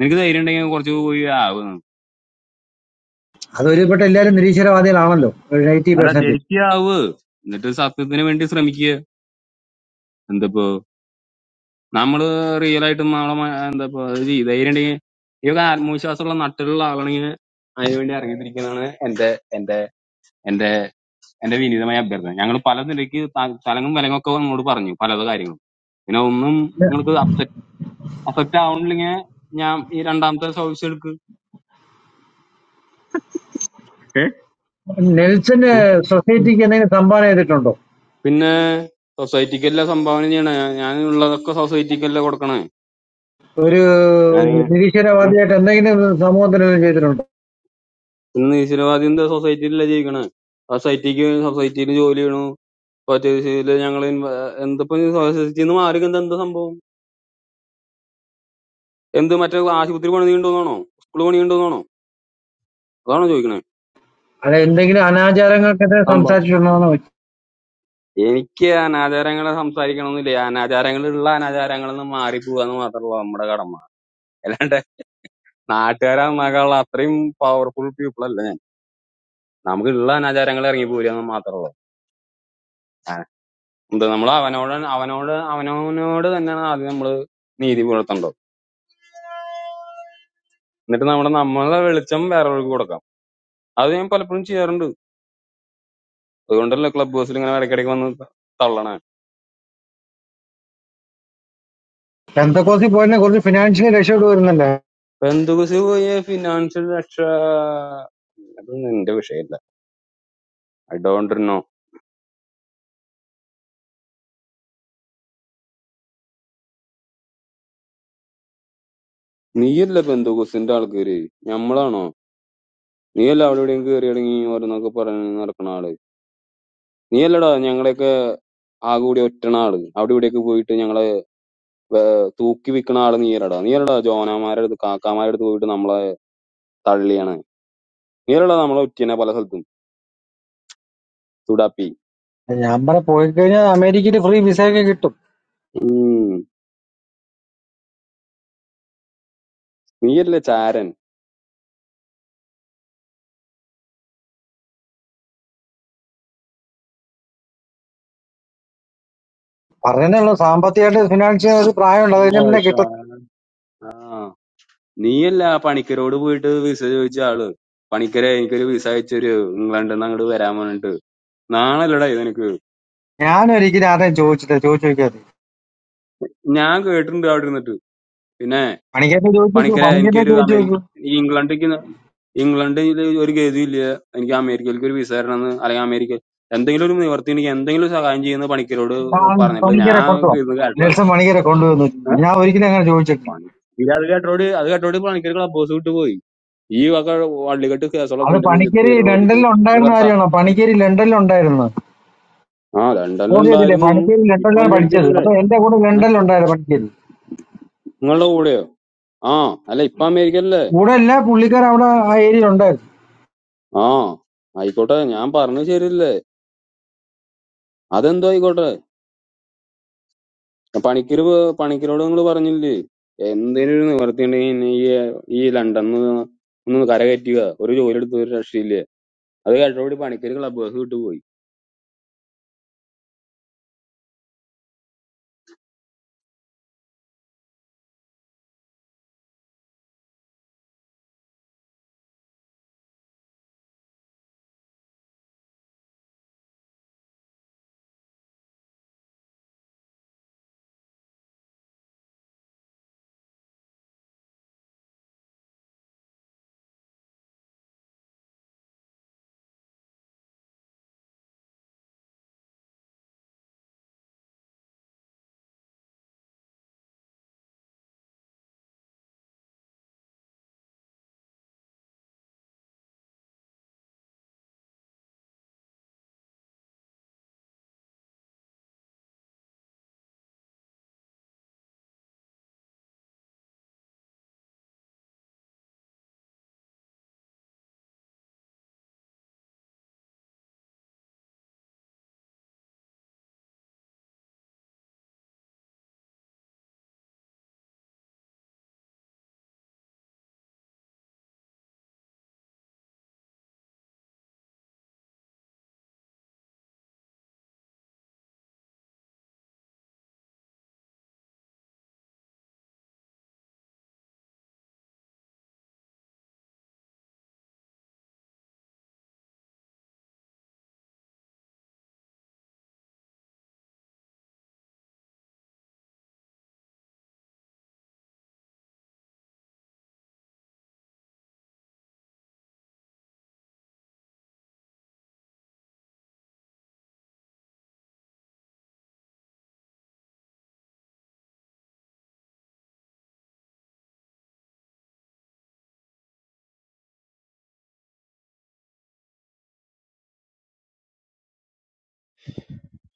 Speaker 12: നിനക്ക് ധൈര്യം ഉണ്ടെങ്കിൽ കുറച്ച് പോയി ആവ് നീ.
Speaker 23: അത് ഒരുപെട്ട എല്ലാവരും നിരീശ്വരവാദികളാണല്ലോ ഒരു നയൻറ്റി
Speaker 12: അല്ല
Speaker 23: പെർസെന്റ്.
Speaker 12: ശരിക്കും ആവ് എന്നിട്ട് സത്യത്തിന് വേണ്ടി ശ്രമിക്കുക എന്തപ്പോ നമ്മള് റിയൽ ആയിട്ടും നമ്മളെ മ- ഇത് ഈ ധൈര്യം ഉണ്ടെങ്കിൽ ഇവക്ക് ആത്മവിശ്വാസമുള്ള നട്ടിലുള്ള ആളാണെങ്കിൽ അതിനു വേണ്ടി ഇറങ്ങിത്തിരിക്കുന്നതാണ് എന്റെ എന്റെ എന്റെ എന്റെ വിനീതമായ അഭ്യർത്ഥന ഞങ്ങൾ പല നിലയ്ക്ക് ത- തലങ്ങും വിലങ്ങും ഒക്കെ നമ്മോട് പറഞ്ഞു പല കാര്യങ്ങളും പിന്നെ ഒന്നും നിങ്ങൾക്ക് അഫക്റ്റ് ആവണില്ലെങ്കിൽ ഞാൻ ഈ രണ്ടാമത്തെ സർവീസ് എടുക്ക് ഏ
Speaker 23: നെൽസന്
Speaker 12: ഏ?
Speaker 23: സൊസൈറ്റിക്ക് എന്തെങ്കിലും സംഭാവന ചെയ്തിട്ടുണ്ടോ
Speaker 12: പിന്നെ സൊസൈറ്റിക്കല്ല സംഭാവന ചെയ്യണേ ഞാൻ ഞാൻ ഉള്ളതൊക്കെ സൊസൈറ്റിക്കല്ല കൊടുക്കണേ
Speaker 23: ഒരു
Speaker 12: ഞാൻ
Speaker 23: നിരീശ്വരവാദിയായിട്ട് എന്തെങ്കിലും സമൂഹത്തിന് എന്തെങ്കിലും ചെയ്തിട്ടുണ്ടോ
Speaker 12: പിന്നെ നിരീശ്വരവാദി എന്താ സൊസൈറ്റിയിലല്ല ജീവിക്കണേ സൊസൈറ്റിക്ക് സൊസൈറ്റിയിൽ ജോലി ചെയ്യണു സൊസൈറ്റിയില് ഞങ്ങൾ എന്തപ്പോ സൊസൈറ്റിയിൽ നിന്ന് മാറി എന്താ എന്താ സംഭവം എന്ത് മറ്റേ ആശുപത്രി പണിയുണ്ടോന്നാണോ സ്കൂൾ പണിയുണ്ടോന്നാണോ അതാണോ ചോദിക്കണേ
Speaker 23: അല്ല എന്തെങ്കിലും അനാചാരങ്ങൾക്കെതിരെ സംസാരിച്ചിട്ടുണ്ടോ എന്ന് ചോദിച്ചു
Speaker 12: എനിക്ക് അനാചാരങ്ങളെ സംസാരിക്കണമെന്നില്ല അനാചാരങ്ങളുള്ള അനാചാരങ്ങളിൽ നിന്ന് മാറിപ്പോവുക എന്ന് മാത്രമുള്ള നമ്മുടെ കടമ അല്ലാണ്ട് നാട്ടുകാരാകുമ്പോൾ അത്രയും പവർഫുൾ പീപ്പിൾ അല്ല ഞാൻ. നമുക്ക് ഉള്ള അനാചാരങ്ങൾ ഇറങ്ങി പോരുക എന്ന് മാത്രമുള്ളൂ ആ, എന്ത് നമ്മൾ അവനോട് അവനോട് അവനവനോട് തന്നെയാണ് ആദ്യം നമ്മൾ നീതി പുലർത്തേണ്ടത് എന്നിട്ട് നമ്മുടെ നമ്മളെ വെളിച്ചം വേറൊരാൾക്ക് കൊടുക്കാം അത് ഞാൻ പലപ്പോഴും ചെയ്യാറുണ്ട് അതുകൊണ്ടല്ലേ ക്ലബ് ഹൗസിൽ ഇങ്ങനെ ഇടയ്ക്കിടയ്ക്ക് വന്ന് ത- തള്ളണേ
Speaker 23: പെന്തക്കോസിൽ പോയതിനെ കുറച്ച് ഫിനാൻഷ്യലി രക്ഷപ്പെട്ട് വരുന്നുണ്ട്
Speaker 12: ബന്ധുക്കുസി പോയ ഫിനാൻഷ്യൽ രക്ഷ അതൊന്നും എന്റെ വിഷയമല്ല ഐ ഡോണ്ട് നീയല്ല ബന്ധുക്കൂസിന്റെ ആൾക്കാര് ഞമ്മളാണോ നീയല്ല അവിടെ എവിടെയും കയറിയിറങ്ങി ഓരോന്നൊക്കെ പറഞ്ഞ് നടക്കണ ആള് നീയല്ലടാ ഞങ്ങളെയൊക്കെ ആകെ കൂടി ഒറ്റണ ആള് അവിടെ ഇവിടെയൊക്കെ പോയിട്ട് ഞങ്ങളെ വേ- തൂക്കി വിൽക്കണ ആള് നീയല്ലടാ നീയല്ലടാ ജോനാമാരുടെ അടുത്ത് കാക്കാമാരുടെ അടുത്ത് പോയിട്ട് നമ്മളെ തള്ളിയാണ് നീയല്ലടാ നമ്മളെ ഒറ്റനെ പല സ്ഥലത്തും തുടാപ്പി
Speaker 23: ഞാൻ പറ പോയി കഴിഞ്ഞാൽ അമേരിക്കയിൽ ഫ്രീ വിസ ഒക്കെ കിട്ടും
Speaker 12: ഉം നീയല്ലേ ചാരൻ
Speaker 23: പറയുന്നല്ലോ സാമ്പത്തികമായിട്ട് ഫിനാൻഷ്യൽ ഒരു പ്രായമുണ്ട്
Speaker 12: അല്ല
Speaker 23: അതിന് പിന്നെ കിട്ടത്തില്ല
Speaker 12: സാ- ആ നീയല്ല ആ പണിക്കരോട് പോയിട്ട് വിസ ചോദിച്ച ആള് പണിക്കരെ എനിക്കൊരു വിസ അയച്ചൊരു ഇംഗ്ലണ്ടിൽ നിന്ന് അങ്ങോട്ട് വരാൻ പറഞ്ഞിട്ട് നാളല്ലടാ ഇതെനിക്ക്
Speaker 23: ഞാൻ ഒരിക്കലും ആരെയും ചോദിച്ചിട്ടില്ല ചോദിച്ചു നോക്കിയാൽ
Speaker 12: ഞാൻ കേട്ടിട്ടുണ്ട് അവിടെ ഇരുന്നിട്ട് പിന്നെ
Speaker 23: പണിക്കരെ ചോദിച്ചു നോക്കൂ
Speaker 12: പണിക്കരെ
Speaker 23: പണിക്കരെ
Speaker 12: എനിക്കൊരു
Speaker 23: ചോദിച്ചു
Speaker 12: അമേരിക്ക
Speaker 23: നോക്കൂ
Speaker 12: ഈ ഇംഗ്ലണ്ടിക്ക് ന- ഇംഗ്ലണ്ടിൽ ഒരു ഗതിയും ഇല്ല എനിക്ക് അമേരിക്കയിലേക്ക് ഒരു വിസ തരണമെന്ന് അല്ലെങ്കിൽ അമേരിക്ക എന്തെങ്കിലും ഒരു നിവർത്തി എനിക്ക് എന്തെങ്കിലും ഒരു സഹായം ചെയ്യുന്ന പണിക്കരോട്
Speaker 23: ആ,
Speaker 12: പറഞ്ഞിട്ടുള്ളത്
Speaker 23: പണിക്കരെ
Speaker 12: ഞാൻ
Speaker 23: കൊണ്ടുപോകാം
Speaker 12: ഇത് കേട്ടില്ല
Speaker 23: നെൽസൺ പണിക്കരെ കൊണ്ടുവന്നു ഞാൻ ഒരിക്കലും അങ്ങനെ ചോദിച്ചിട്ടില്ല
Speaker 12: പണിക്കര് അത് കേട്ടോട് അത് കേട്ടോട് പണിക്കര് ക്ലബ് ഹൗസ് വിട്ടു പോയി ഈ വക വള്ളികെട്ട് കേസുകളൊക്കെ
Speaker 23: അത്
Speaker 12: എന്റെ നെഞ്ചത്ത്
Speaker 23: പണിക്കര്
Speaker 12: കയറുള്ള വെച്ചിട്ട്
Speaker 23: ലണ്ടനിൽ
Speaker 12: എന്റെ
Speaker 23: ഉണ്ടായിരുന്ന
Speaker 12: കർത്ത
Speaker 23: കാര്യമാണ് പണിക്കര് ലണ്ടനിൽ ഉണ്ടായിരുന്നു
Speaker 12: ആ
Speaker 23: അറിയത്തില്ലേ
Speaker 12: ലണ്ടനിലുണ്ടായിരുന്നു
Speaker 23: പണിക്കര്
Speaker 12: ഇപ്പൊ
Speaker 23: ലണ്ടനിലാണ് പഠിച്ചത്
Speaker 12: അമേരിക്കയിലല്ലേ
Speaker 23: അപ്പൊ എന്റെ കൂടെ
Speaker 12: ഏ?
Speaker 23: ലണ്ടനിൽ ഉണ്ടായിരുന്നു പണിക്കര്
Speaker 12: നിങ്ങളുടെ കൂടെയോ ആ അല്ല ഇപ്പൊ അമേരിക്കയിലല്ലേ
Speaker 23: കൂടെ അല്ല പുള്ളിക്കാരൻ അവിടെ ആ ഏരിയ ഉണ്ടായിരുന്നു
Speaker 12: ആ ആയിക്കോട്ടെ ഞാൻ പറഞ്ഞത് ശരിയല്ലേ അതെന്തോ ആയിക്കോട്ടെ പണിക്കര് പ- പണിക്കരോട് നിങ്ങൾ പറഞ്ഞില്ലേ എന്തേലും ഒരു നിവർത്തി ഉണ്ടെങ്കിൽ ഇനി ഈ ഈ ലണ്ടനിൽ നിന്ന് ഒന്ന് കരകയറ്റുക ഒരു ജോലി എടുത്ത് ഒരു രക്ഷയില്ല അത് കേട്ടോടി പണിക്കര് ക്ലബ് ഹൗസ് വിട്ടു പോയി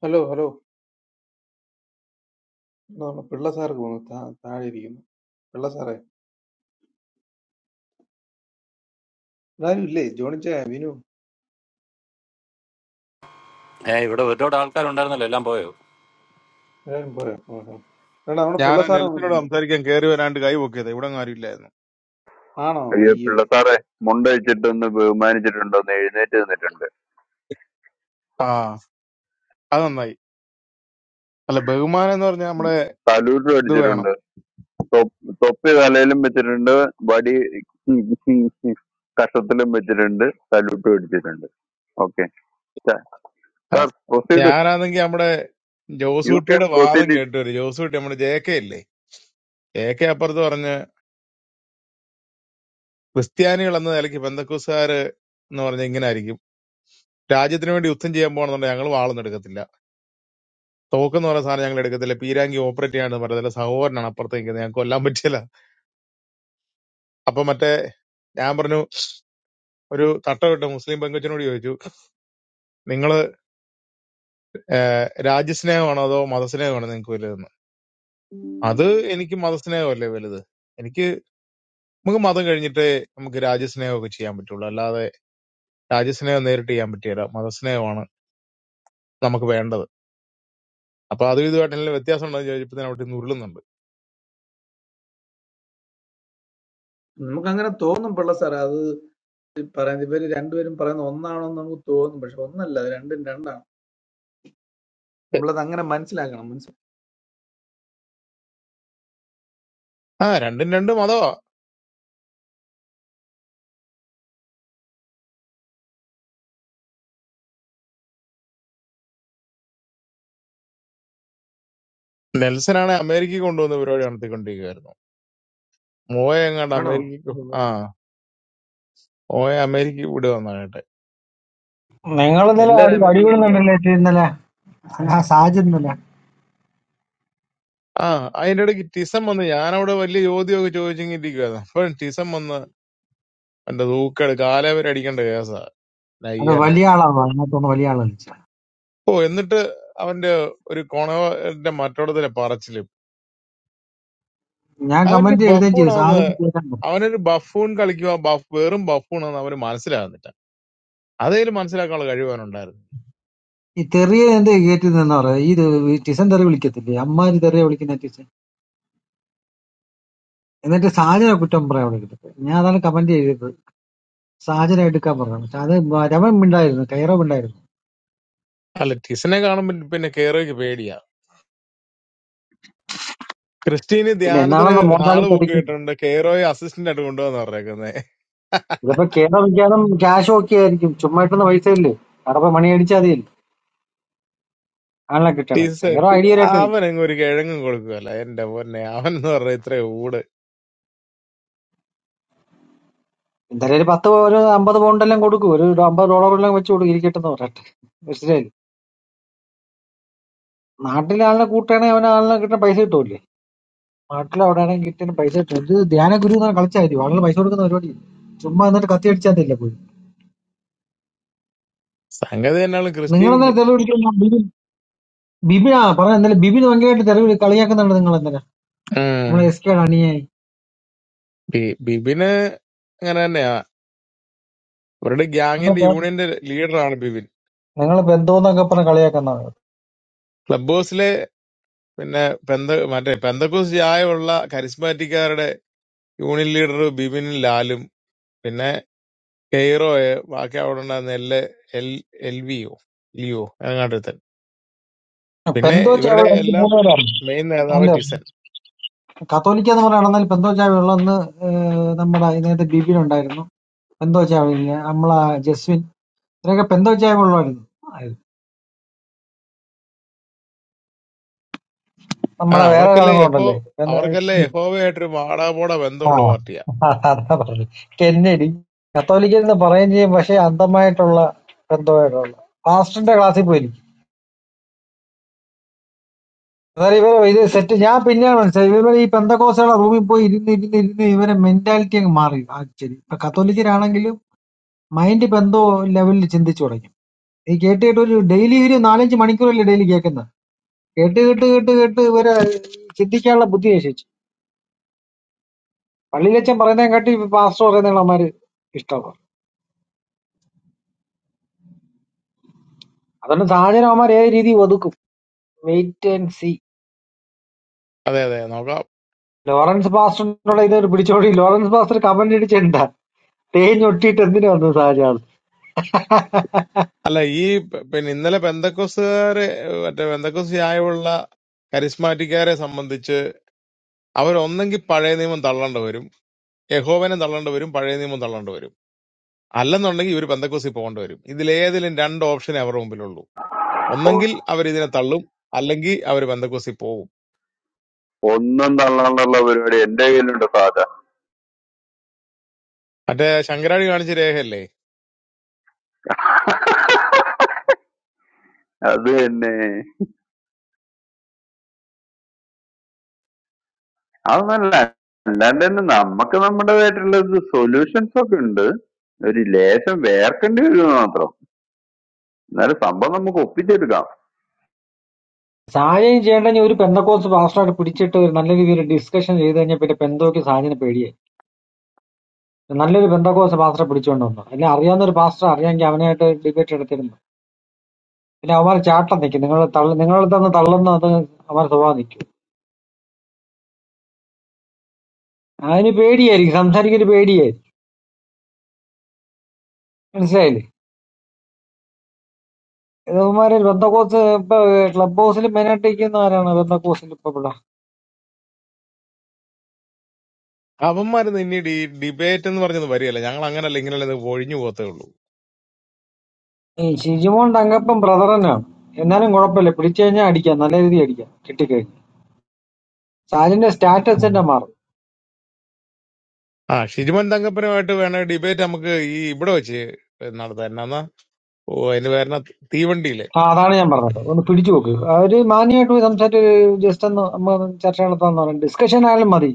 Speaker 24: ഹലോ ഹലോ എന്നാ നമ്മുടെ പിള്ള സാർ പോകുന്നു താ- താഴെ ഇരിക്കുന്നു പിള്ള സാറേ ഇതാരും ഇല്ലേ ജോണിച്ചായ വിനു
Speaker 7: ആരുണ്ടടാ ഏ ഇവിടെ ഒരുപാട് ആൾക്കാരുണ്ടായിരുന്നല്ലോ എല്ലാം പോയോ
Speaker 24: എല്ലാരും പോയോ ആഹാ. എടാ നമ്മുടെ
Speaker 25: ഞാൻ
Speaker 24: പിള്ള സാറ്
Speaker 25: നെൽസിനോട്
Speaker 24: വന്നിട്ടുണ്ട്
Speaker 25: സംസാരിക്കാൻ കയറി വരാണ്ട് കൈ പൊക്കിയത് ഇവിടെ അങ്ങ് ആരുമില്ലായിരുന്നു
Speaker 24: ആണോ
Speaker 22: അയ്യോ
Speaker 24: അയ്യോ
Speaker 22: പിള്ള സാറേ മുണ്ട വെച്ചിട്ടൊന്ന് ബഹുമാനിച്ചിട്ടുണ്ട് ഒന്ന് എഴുന്നേറ്റ് നിന്നിട്ടുണ്ട്
Speaker 25: ആ അത് നന്നായി അല്ല ബഹുമാനം എന്ന് പറഞ്ഞാൽ നമ്മുടെ
Speaker 22: സല്യൂട്ടും
Speaker 25: ഇത് വേണം
Speaker 22: അടിച്ചിട്ടുണ്ട് തൊപ്പ്- തൊപ്പി തലയിലും വെച്ചിട്ടുണ്ട് വടി കഷത്തിലും വെച്ചിട്ടുണ്ട് സല്യൂട്ടും അടിച്ചിട്ടുണ്ട് ഓക്കെ
Speaker 25: ആ,
Speaker 22: സാർ പ്രൊസീഡ്
Speaker 25: ഞാനാണെങ്കി നമ്മുടെ
Speaker 22: യു ക്യാൻ
Speaker 25: ജോസൂട്ടിയുടെ വാദം
Speaker 22: പ്രൊസീഡ്
Speaker 25: കേട്ടു വരും ജോസൂട്ടി നമ്മുടെ ജെ കെ ഇല്ലേ ജെ കെ അപ്പുറത്ത് പറഞ്ഞ് ക്രിസ്ത്യാനികൾ എന്ന നിലയ്ക്ക് ബന്ധക്കുസാര് എന്ന് പറഞ്ഞ ഇങ്ങനെ ആയിരിക്കും രാജ്യത്തിന് വേണ്ടി യുദ്ധം ചെയ്യാൻ പോകണമെന്നുണ്ടെങ്കിൽ ഞങ്ങൾ വാളൊന്നും എടുക്കത്തില്ല തോക്കെന്ന് പറയുന്ന സാധനം ഞങ്ങൾ എടുക്കത്തില്ല പീരാങ്കി ഓപ്പറേറ്റ് ചെയ്യാണ്ട് പറഞ്ഞതില്ല സഹോദരനാണ് അപ്പുറത്ത് നിൽക്കുന്നത് ഞങ്ങൾക്ക് കൊല്ലാൻ പറ്റില്ല അപ്പൊ മറ്റേ ഞാൻ പറഞ്ഞു ഒരു തട്ടമിട്ട മുസ്ലിം പെങ്കൊച്ചിനോട് ചോദിച്ചു നിങ്ങള് രാജ്യസ്നേഹമാണോ അതോ അത് എനിക്ക് മതസ്നേഹമല്ലേ വലുത് എനിക്ക് നമുക്ക് മതം കഴിഞ്ഞിട്ട് നമുക്ക് രാജ്യസ്നേഹമൊക്കെ ചെയ്യാൻ പറ്റുള്ളൂ അല്ലാതെ രാജ്യസ്നേഹം നേരിട്ട് ചെയ്യാൻ പറ്റിയല്ല മതസ്നേഹമാണ് നമുക്ക് വേണ്ടത് അപ്പൊ അതും ഇതുമായിട്ട് നല്ല വ്യത്യാസം ഉണ്ടെന്ന് ചോദിച്ചപ്പോ ഞാൻ അവിടെ ഉരുളുന്നുണ്ട്
Speaker 24: നമുക്ക് അങ്ങനെ തോന്നും പിള്ള സാറേ അത് ഈ പറയുന്നത് ഇവര് രണ്ടുപേരും പറയുന്ന ഒന്നാണോ എന്ന് നമുക്ക് തോന്നും പക്ഷെ ഒന്നല്ല അത് രണ്ടും രണ്ടാണ് നമ്മളത് അങ്ങനെ മനസ്സിലാക്കണം മനസ്സിലാക്കണം
Speaker 25: ആ രണ്ടും രണ്ട് മതമാ നെൽസനാണ് അമേരിക്കയിൽ കൊണ്ടുവന്ന പരിപാടി നടത്തിക്കൊണ്ടിരിക്കുകയായിരുന്നു മോയെ എങ്ങാണ്ട്
Speaker 24: ആണോ
Speaker 25: അമേരിക്കക്ക് ആ
Speaker 24: ഓ.
Speaker 25: മോയെ അമേരിക്കക്ക് ഇവിടെ വന്നാകട്ടെ
Speaker 23: നിങ്ങൾ ഇന്നലെ അടി
Speaker 24: എല്ലാരും അമേരിക്കയ്ക്ക് വിടും
Speaker 23: അടിപൊളിന്നുണ്ടല്ലേ ഇന്നലെ ആ സാജ് ഇന്നലെ
Speaker 25: ആ അതിന്റെ ഇടയ്ക്ക് ടിസം വന്ന് ഞാനവിടെ വലിയ ചോദ്യമൊക്കെ ചോദിച്ചെങ്കിൽ ഇരിക്കുവായിരുന്നു അപ്പൊ ടിസം വന്ന് എന്റെ തൂക്കെടു കാലവരെ അടിക്കേണ്ട
Speaker 23: അത്
Speaker 25: കേസാ
Speaker 23: വലിയ ആളാണ് അതിനകത്തൊന്ന് വലിയ ആളാണ് വിളിച്ചത്.
Speaker 25: ഓ എന്നിട്ട് അവന്റെ ഒരു കോണവന്റെ മറ്റോടത്തിലെ പറച്ചിലും
Speaker 23: ഞാൻ
Speaker 25: അവനൊരു
Speaker 23: കമന്റ് എഴുതുകയും ചെയ്തു
Speaker 25: ബഫൂണാന്ന്,
Speaker 23: സാജന് കേൾക്കാൻ പറ്റും.
Speaker 25: അവനൊരു ബഫൂൺ കളിക്കുക, ബഫ് വെറും ബഫൂണാന്ന് അവന് മനസ്സിലാകുന്നില്ല. അതേലും മനസ്സിലാക്കാനുള്ള കഴിവ് അവനുണ്ടായിരുന്നു.
Speaker 23: ഈ തെറിയ എന്ത് കയറ്റി നിന്ന പറയാ ഈ തെ- ഈ ടിസൻ തെറി വിളിക്കത്തില്ലേ അമ്മാര് തെറിയ വിളിക്കുന്ന ടിസൻ എന്നിട്ട് സാജനെ കുറ്റം പറയാൻ വിളിക്കത്തില്ല ഞാൻ അതാണ് കമന്റ് ചെയ്തത് സാജനെ എടുക്കാൻ പറയണം അത് രമൻ ഉണ്ടായിരുന്നു കൈറവ്
Speaker 25: അല്ല, ടിസനെ കാണുമ്പോൾ പിന്നെ കേറോയ്ക്ക് പേടിയാ. ക്രിസ്റ്റീന്
Speaker 23: പിന്നെ
Speaker 25: ധ്യാനത്തിന്
Speaker 23: എന്നാണെന്ന് മോശാലി
Speaker 25: ഹാള് ബുക്ക്
Speaker 23: ചതിക്കും
Speaker 25: ചെയ്തിട്ടുണ്ട്, കേറോയെ അസിസ്റ്റന്റ് ആയിട്ട് കൊണ്ടുവന്ന് പറഞ്ഞേക്കുന്നത്.
Speaker 23: ഇതിപ്പോ കേരള വിഖ്യാതം ക്യാഷ് ഒക്കെ ആയിരിക്കും ചുമ്മാ ഇട്ടുന്ന പൈസ ഇല്ലേ അവിടെ പോയി മണി അടിച്ചാൽ മതിയല്ലേ ആണല്ലോ കിട്ടണമെങ്കിൽ
Speaker 25: ടിസ
Speaker 23: ടൈറോ ഐഡിയ ആയിട്ട് കളിക്കും
Speaker 25: അവനങ്ങ് ഒരു കിഴങ്ങും കൊടുക്കുകയല്ല. എന്റെ പൊന്നെ, അവൻ എന്ന് പറഞ്ഞ ഇത്ര ഊട്
Speaker 23: എന്തായാലും ഒരു പത്ത് ഒരു അമ്പത് പൗണ്ടെല്ലാം കൊടുക്കും ഒരു അമ്പത് ഡോളറെല്ലാം വെച്ച് കൊടുക്കും ഇരിക്കട്ടെ എന്ന് പറയട്ടെ മനസ്സിലായില്ലേ നാട്ടിലെ ആളിനെ കൂട്ടുകയാണെങ്കിൽ അവന് ആളിനെ കിട്ടുന്ന പൈസ കിട്ടൂല്ലേ നാട്ടിൽ അവിടെ ആണെങ്കിൽ കിട്ടുന്ന പൈസ കിട്ടും ഇത് ധ്യാന ഗുരു എന്നാണ് കളിച്ചായിരിക്കും ആളുകൾ പൈസ കൊടുക്കുന്ന പരിപാടി ചുമ്മാ എന്നിട്ട് കത്തി അടിച്ചാൽ മതിയല്ലേ പോയി
Speaker 25: സംഗതി തന്നെയാണ്
Speaker 23: നിങ്ങൾ എന്നാൽ
Speaker 25: ക്രിസ്റ്റീനിന്റെ.
Speaker 23: തെളിവ് വിളിക്കുന്ന ബിബിൻ ബിബിൻ ആ പറഞ്ഞ എന്തായാലും ബിബിൻ ഭയങ്കരമായിട്ട് തെളിവ് കളി- കളിയാക്കുന്നുണ്ട് നിങ്ങൾ എന്തിനാ
Speaker 25: ഉം.
Speaker 23: നമ്മളെ എസ് കെയുടെ
Speaker 25: ബി- ബിബിന് അങ്ങനെ തന്നെയാ. അവരുടെ ഗ്യാങ്ങിന്റെ
Speaker 23: അണിയായി
Speaker 25: യൂണിയന്റെ ലീഡറാണ് ബിബിൻ.
Speaker 23: നിങ്ങൾ പെന്തോന്നൊക്കെ പറഞ്ഞ് കളിയാക്കുന്നതാണ്
Speaker 25: ക്ലബ് ഹൗസിലെ പിന്നെ പെന്ത മറ്റേ പെന്തക്കോസ് ചായവുള്ള കരിസ്മാറ്റിക്കാരുടെ യൂണിയൻ ലീഡർ ബിബിൻ ലാലും പിന്നെ കെയ്റോയെ ബാക്കി അവിടെ ഉണ്ടായിരുന്ന എൽ എൽ എൽ വിയോ ലിയോ അങ്ങാട്ടത്തൻ പിന്നെ
Speaker 23: പെന്തോ
Speaker 25: ഇവരുടെ
Speaker 23: ചായവെള്ളം എനിക്ക്
Speaker 25: എല്ലാം
Speaker 23: മൂന്ന് പേരാണ്
Speaker 25: മെയിൻ നേതാവ്
Speaker 23: അല്ല
Speaker 25: ടിസൻ
Speaker 23: കത്തോലിക്ക എന്ന് പറയുകയാണെങ്കിൽ പെന്തോ ചായവെള്ളം അന്ന് ഏഹ്, നമ്മുടെ ഇതിനകത്ത് ബിബിനുണ്ടായിരുന്നു പെന്തോ ചായ നമ്മളെ ജസ്വിൻ ഇവരൊക്കെ പെന്തോ ചായ വെള്ളമായിരുന്നു
Speaker 25: ആ
Speaker 23: നമ്മുടെ വേറെ
Speaker 25: അവർക്കല്ലേ യഹോ
Speaker 23: ഒരാളുകളുണ്ടല്ലേ
Speaker 25: അവർക്കല്ലേ
Speaker 23: പെന്തോ-
Speaker 25: യഹോവയായിട്ടൊരു വാടാപോട
Speaker 23: ആ
Speaker 25: ബന്ധമുള്ള പാർട്ടിയാ
Speaker 23: അതാ പറഞ്ഞത് കെന്നഡി കത്തോലിക്ക എന്ന് പറയുകയും ചെയ്യും പക്ഷെ അന്ധമായിട്ടുള്ള പെന്തോയായിട്ടുള്ള പാസ്റ്ററിന്റെ ക്ലാസ്സിൽ പോയി അതായത് ഇവരെ ഇത് സെറ്റ് ഞാൻ പിന്നെയാണ് മനസ്സിലായത് ഇവരെ ഈ പെന്തക്കോസുകളുടെ റൂമിൽ പോയി ഇരുന്ന് ഇരുന്ന് ഇരുന്ന് ഇവരെ മെന്റാലിറ്റി അങ്ങ് മാറി ആക്ച്വലി ഇപ്പൊ കത്തോലിക്കരാണെങ്കിലും മൈൻഡ് ബന്ധോ ലെവലിൽ ചിന്തിച്ചു തുടങ്ങി ഈ കേട്ട് കേട്ട് ഒരു ഡെയിലി ഒരു നാലഞ്ച് മണിക്കൂറല്ലേ ഡെയിലി കേൾക്കുന്നത് കേട്ട് കേട്ട് കേട്ട് കേട്ട് ഇവരെ ചിന്തിക്കാനുള്ള ബുദ്ധി ശേഷിച്ചു പള്ളിയിലച്ചൻ പറയുന്നതിനെ കാട്ടി പാസ്റ്റർ പറയുന്നവന്മാര് ഇഷ്ടമാണ് അതുകൊണ്ട് സാഹചര്യം അവന്മാർ ഏത് രീതി ഒതുക്കും വെയിറ്റ് ആൻഡ് സി
Speaker 25: അതെ അതെ നോക്കാം
Speaker 23: ലോറൻസ് പാസ്റ്ററിനോട് ഇതൊരു പിടിച്ചോടി ലോറൻസ് പാസ്റ്റർ കമന്റ് അടിച്ചിട്ടുണ്ടാ തേഞ്ഞൊട്ടിയിട്ട് എന്തിനു വന്നു സാഹചര്യം
Speaker 25: അല്ല ഈ പ- പിന്നെ ഇന്നലെ പെന്തക്കോസുകാര് മറ്റേ പെന്തക്കോസ് ചായവുള്ള കരിസ്മാറ്റിക്കാരെ സംബന്ധിച്ച് അവരൊന്നെങ്കിൽ പഴയ നിയമം തള്ളേണ്ട വരും യഹോവനെ തള്ളേണ്ടി വരും പഴയ നിയമം തള്ളേണ്ടി വരും അല്ലെന്നുണ്ടെങ്കിൽ ഇവർ പെന്തക്കോസിൽ പോകേണ്ടി വരും ഇതിലേതിലും രണ്ട് ഓപ്ഷനേ അവരുടെ മുമ്പിലുള്ളൂ ഒന്നെങ്കിൽ അവർ ഇതിനെ തള്ളും അല്ലെങ്കിൽ അവർ പെന്തക്കോസിൽ പോകും
Speaker 22: ഒന്നും തള്ളാനുള്ള പരിപാടി എന്റെ കയ്യിലുണ്ട് സാധാ
Speaker 25: മറ്റേ ശങ്കരാടി കാണിച്ച രേഖയല്ലേ
Speaker 22: അത് തന്നെ അതൊന്നല്ല അല്ലാണ്ട് തന്നെ നമുക്ക് നമ്മുടേതായിട്ടുള്ള സൊല്യൂഷൻസ് ഒക്കെ ഉണ്ട് ഒരു ലേശം വേർക്കേണ്ടി വരും മാത്രം എന്നാലും സംഭവം നമുക്ക് ഒപ്പിച്ചെടുക്കാം
Speaker 23: ഷാജയും ചേട്ടനും ഒരു പെന്തക്കോസ്ത് പാസ്റ്ററെ പിടിച്ചിട്ട് ഒരു നല്ല രീതിയിൽ ഡിസ്കഷൻ ചെയ്ത് കഴിഞ്ഞാൽ പിന്നെ പെന്തോക്ക് ഷാജിന് പേടിയായി നല്ലൊരു പെന്തക്കോസ്ത് പാസ്റ്ററെ പിടിച്ചുകൊണ്ട് വന്നു അല്ലെ അറിയാവുന്ന ഒരു പാസ്റ്റർ അറിയാമെങ്കിൽ അവനായിട്ട് ഡിബേറ്റ് എടുത്തിരുന്നു പിന്നെ അവന്മാർ ചാട്ടം നിൽക്കും നിങ്ങൾ തള്ളു നിങ്ങളെ തന്നെ തള്ളുന്ന അത് അവന്മാർ സ്വഭാവം നിൽക്കും അതിന് പേടിയായിരിക്കും സംസാരിക്കൊരു പേടിയായിരിക്കും മനസ്സിലായില്ലേ ഇവന്മാര് ബന്ധക്കോസ് ഇപ്പൊ ക്ലബ് ഹൗസിൽ മെയിനായിട്ട് ഇരിക്കുന്നവരാണ് ബന്ധക്കോസിൽ ഇപ്പൊ ഇവിടെ
Speaker 25: അവന്മാരിന്ന് ഇനി ഡി ഡിബേറ്റ് എന്ന് പറഞ്ഞത് വരികയല്ല ഞങ്ങൾ അങ്ങനല്ല ഇങ്ങനെയല്ല ഇത് ഒഴിഞ്ഞു പോകത്തേ ഉള്ളൂ
Speaker 23: ഈ ഷിജിമോൻ തങ്കപ്പൻ ബ്രദറനാണ് എന്നാലും കുഴപ്പമില്ല പിടിച്ചു കഴിഞ്ഞാൽ അടിക്കാം നല്ല രീതിയിൽ അടിക്കാം കിട്ടിക്കഴിഞ്ഞു സാലിന്റെ സ്റ്റാറ്റസ്
Speaker 25: ഉം.
Speaker 23: തന്നെ മാറും
Speaker 25: ആ ഷിജുമൻ തങ്കപ്പനുമായിട്ട് വേണ ഡിബേറ്റ് നമുക്ക് ഈ ഇവിടെ വെച്ച് നടത്താം എന്നാ അതിന് പേരണ തീവണ്ടിയിലെ
Speaker 23: ആ അതാണ് ഞാൻ പറഞ്ഞത് ഒന്ന് പിടിച്ചു നോക്ക് അവര് മാന്യമായിട്ട് പോയി സംസാരിച്ച് ജസ്റ്റ് ഒന്ന് നമ്മ ഒന്ന് ചർച്ച നടത്താന്ന് പറയാം ഡിസ്കഷൻ ആയാലും മതി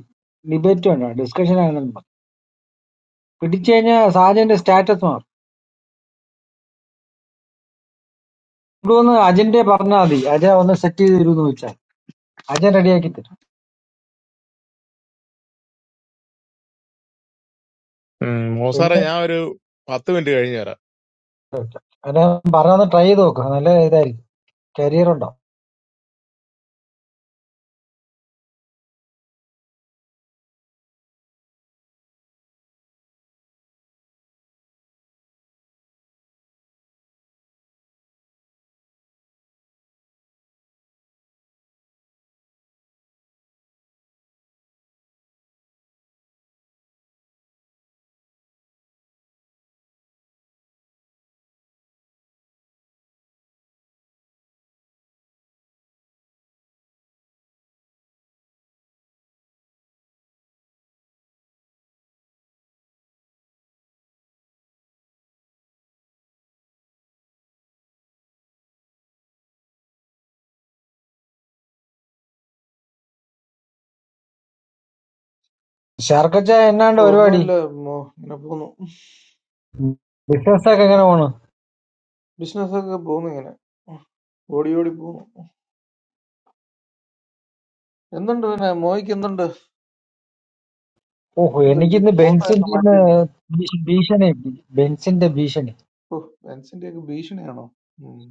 Speaker 23: ഡിബേറ്റ് വേണ്ട ഡിസ്കഷൻ ആയാലും മതി പിടിച്ചു കഴിഞ്ഞാൽ സാജന്റെ സ്റ്റാറ്റസ് മാറും ഇവിടെ ഒന്ന് അജന്റെ പറഞ്ഞാൽ മതി അജയ ഒന്ന് സെറ്റ് ചെയ്ത് തരുമെന്ന് ചോദിച്ചാൽ അജയൻ റെഡിയാക്കി തരും
Speaker 25: ഉം, മോസാറെ
Speaker 23: പിന്നെ
Speaker 25: ഞാൻ ഒരു പത്ത് മിനിറ്റ് കഴിഞ്ഞു വരാം
Speaker 23: അതെ പറഞ്ഞൊന്ന് ട്രൈ ചെയ്ത് നോക്ക് നല്ല ഇതായിരിക്കും കരിയർ ഉണ്ടാവും ശർക്കച്ച എന്നാണ്ട്
Speaker 24: ഓ,
Speaker 23: പരിപാടി
Speaker 24: ഒന്നുമില്ല മോ ഇങ്ങനെ പോന്നു
Speaker 23: ബിസിനസ് ഒക്കെ എങ്ങനെ പോണ്
Speaker 24: ബിസിനസ് ഒക്കെ പോന്നു ഇങ്ങനെ ഓടി ഓടി പോന്നു എന്തുണ്ട് പിന്നെ മോയ്ക്ക് എന്തുണ്ട്
Speaker 23: ഓഹോ
Speaker 24: എന്ത്
Speaker 23: എനിക്കിന്ന്
Speaker 24: ഫോട്ടോ ഒക്കെ
Speaker 23: ബെൻസിന്റെ ഇന്ന്
Speaker 24: മാറ്റിയല്ലോ
Speaker 23: ഭീഷണി ഭീഷണി ബെൻസിന്റെ ഭീഷണി
Speaker 24: ഓ ബെൻസിന്റെ ഒക്കെ ഭീഷണിയാണോ ഉം.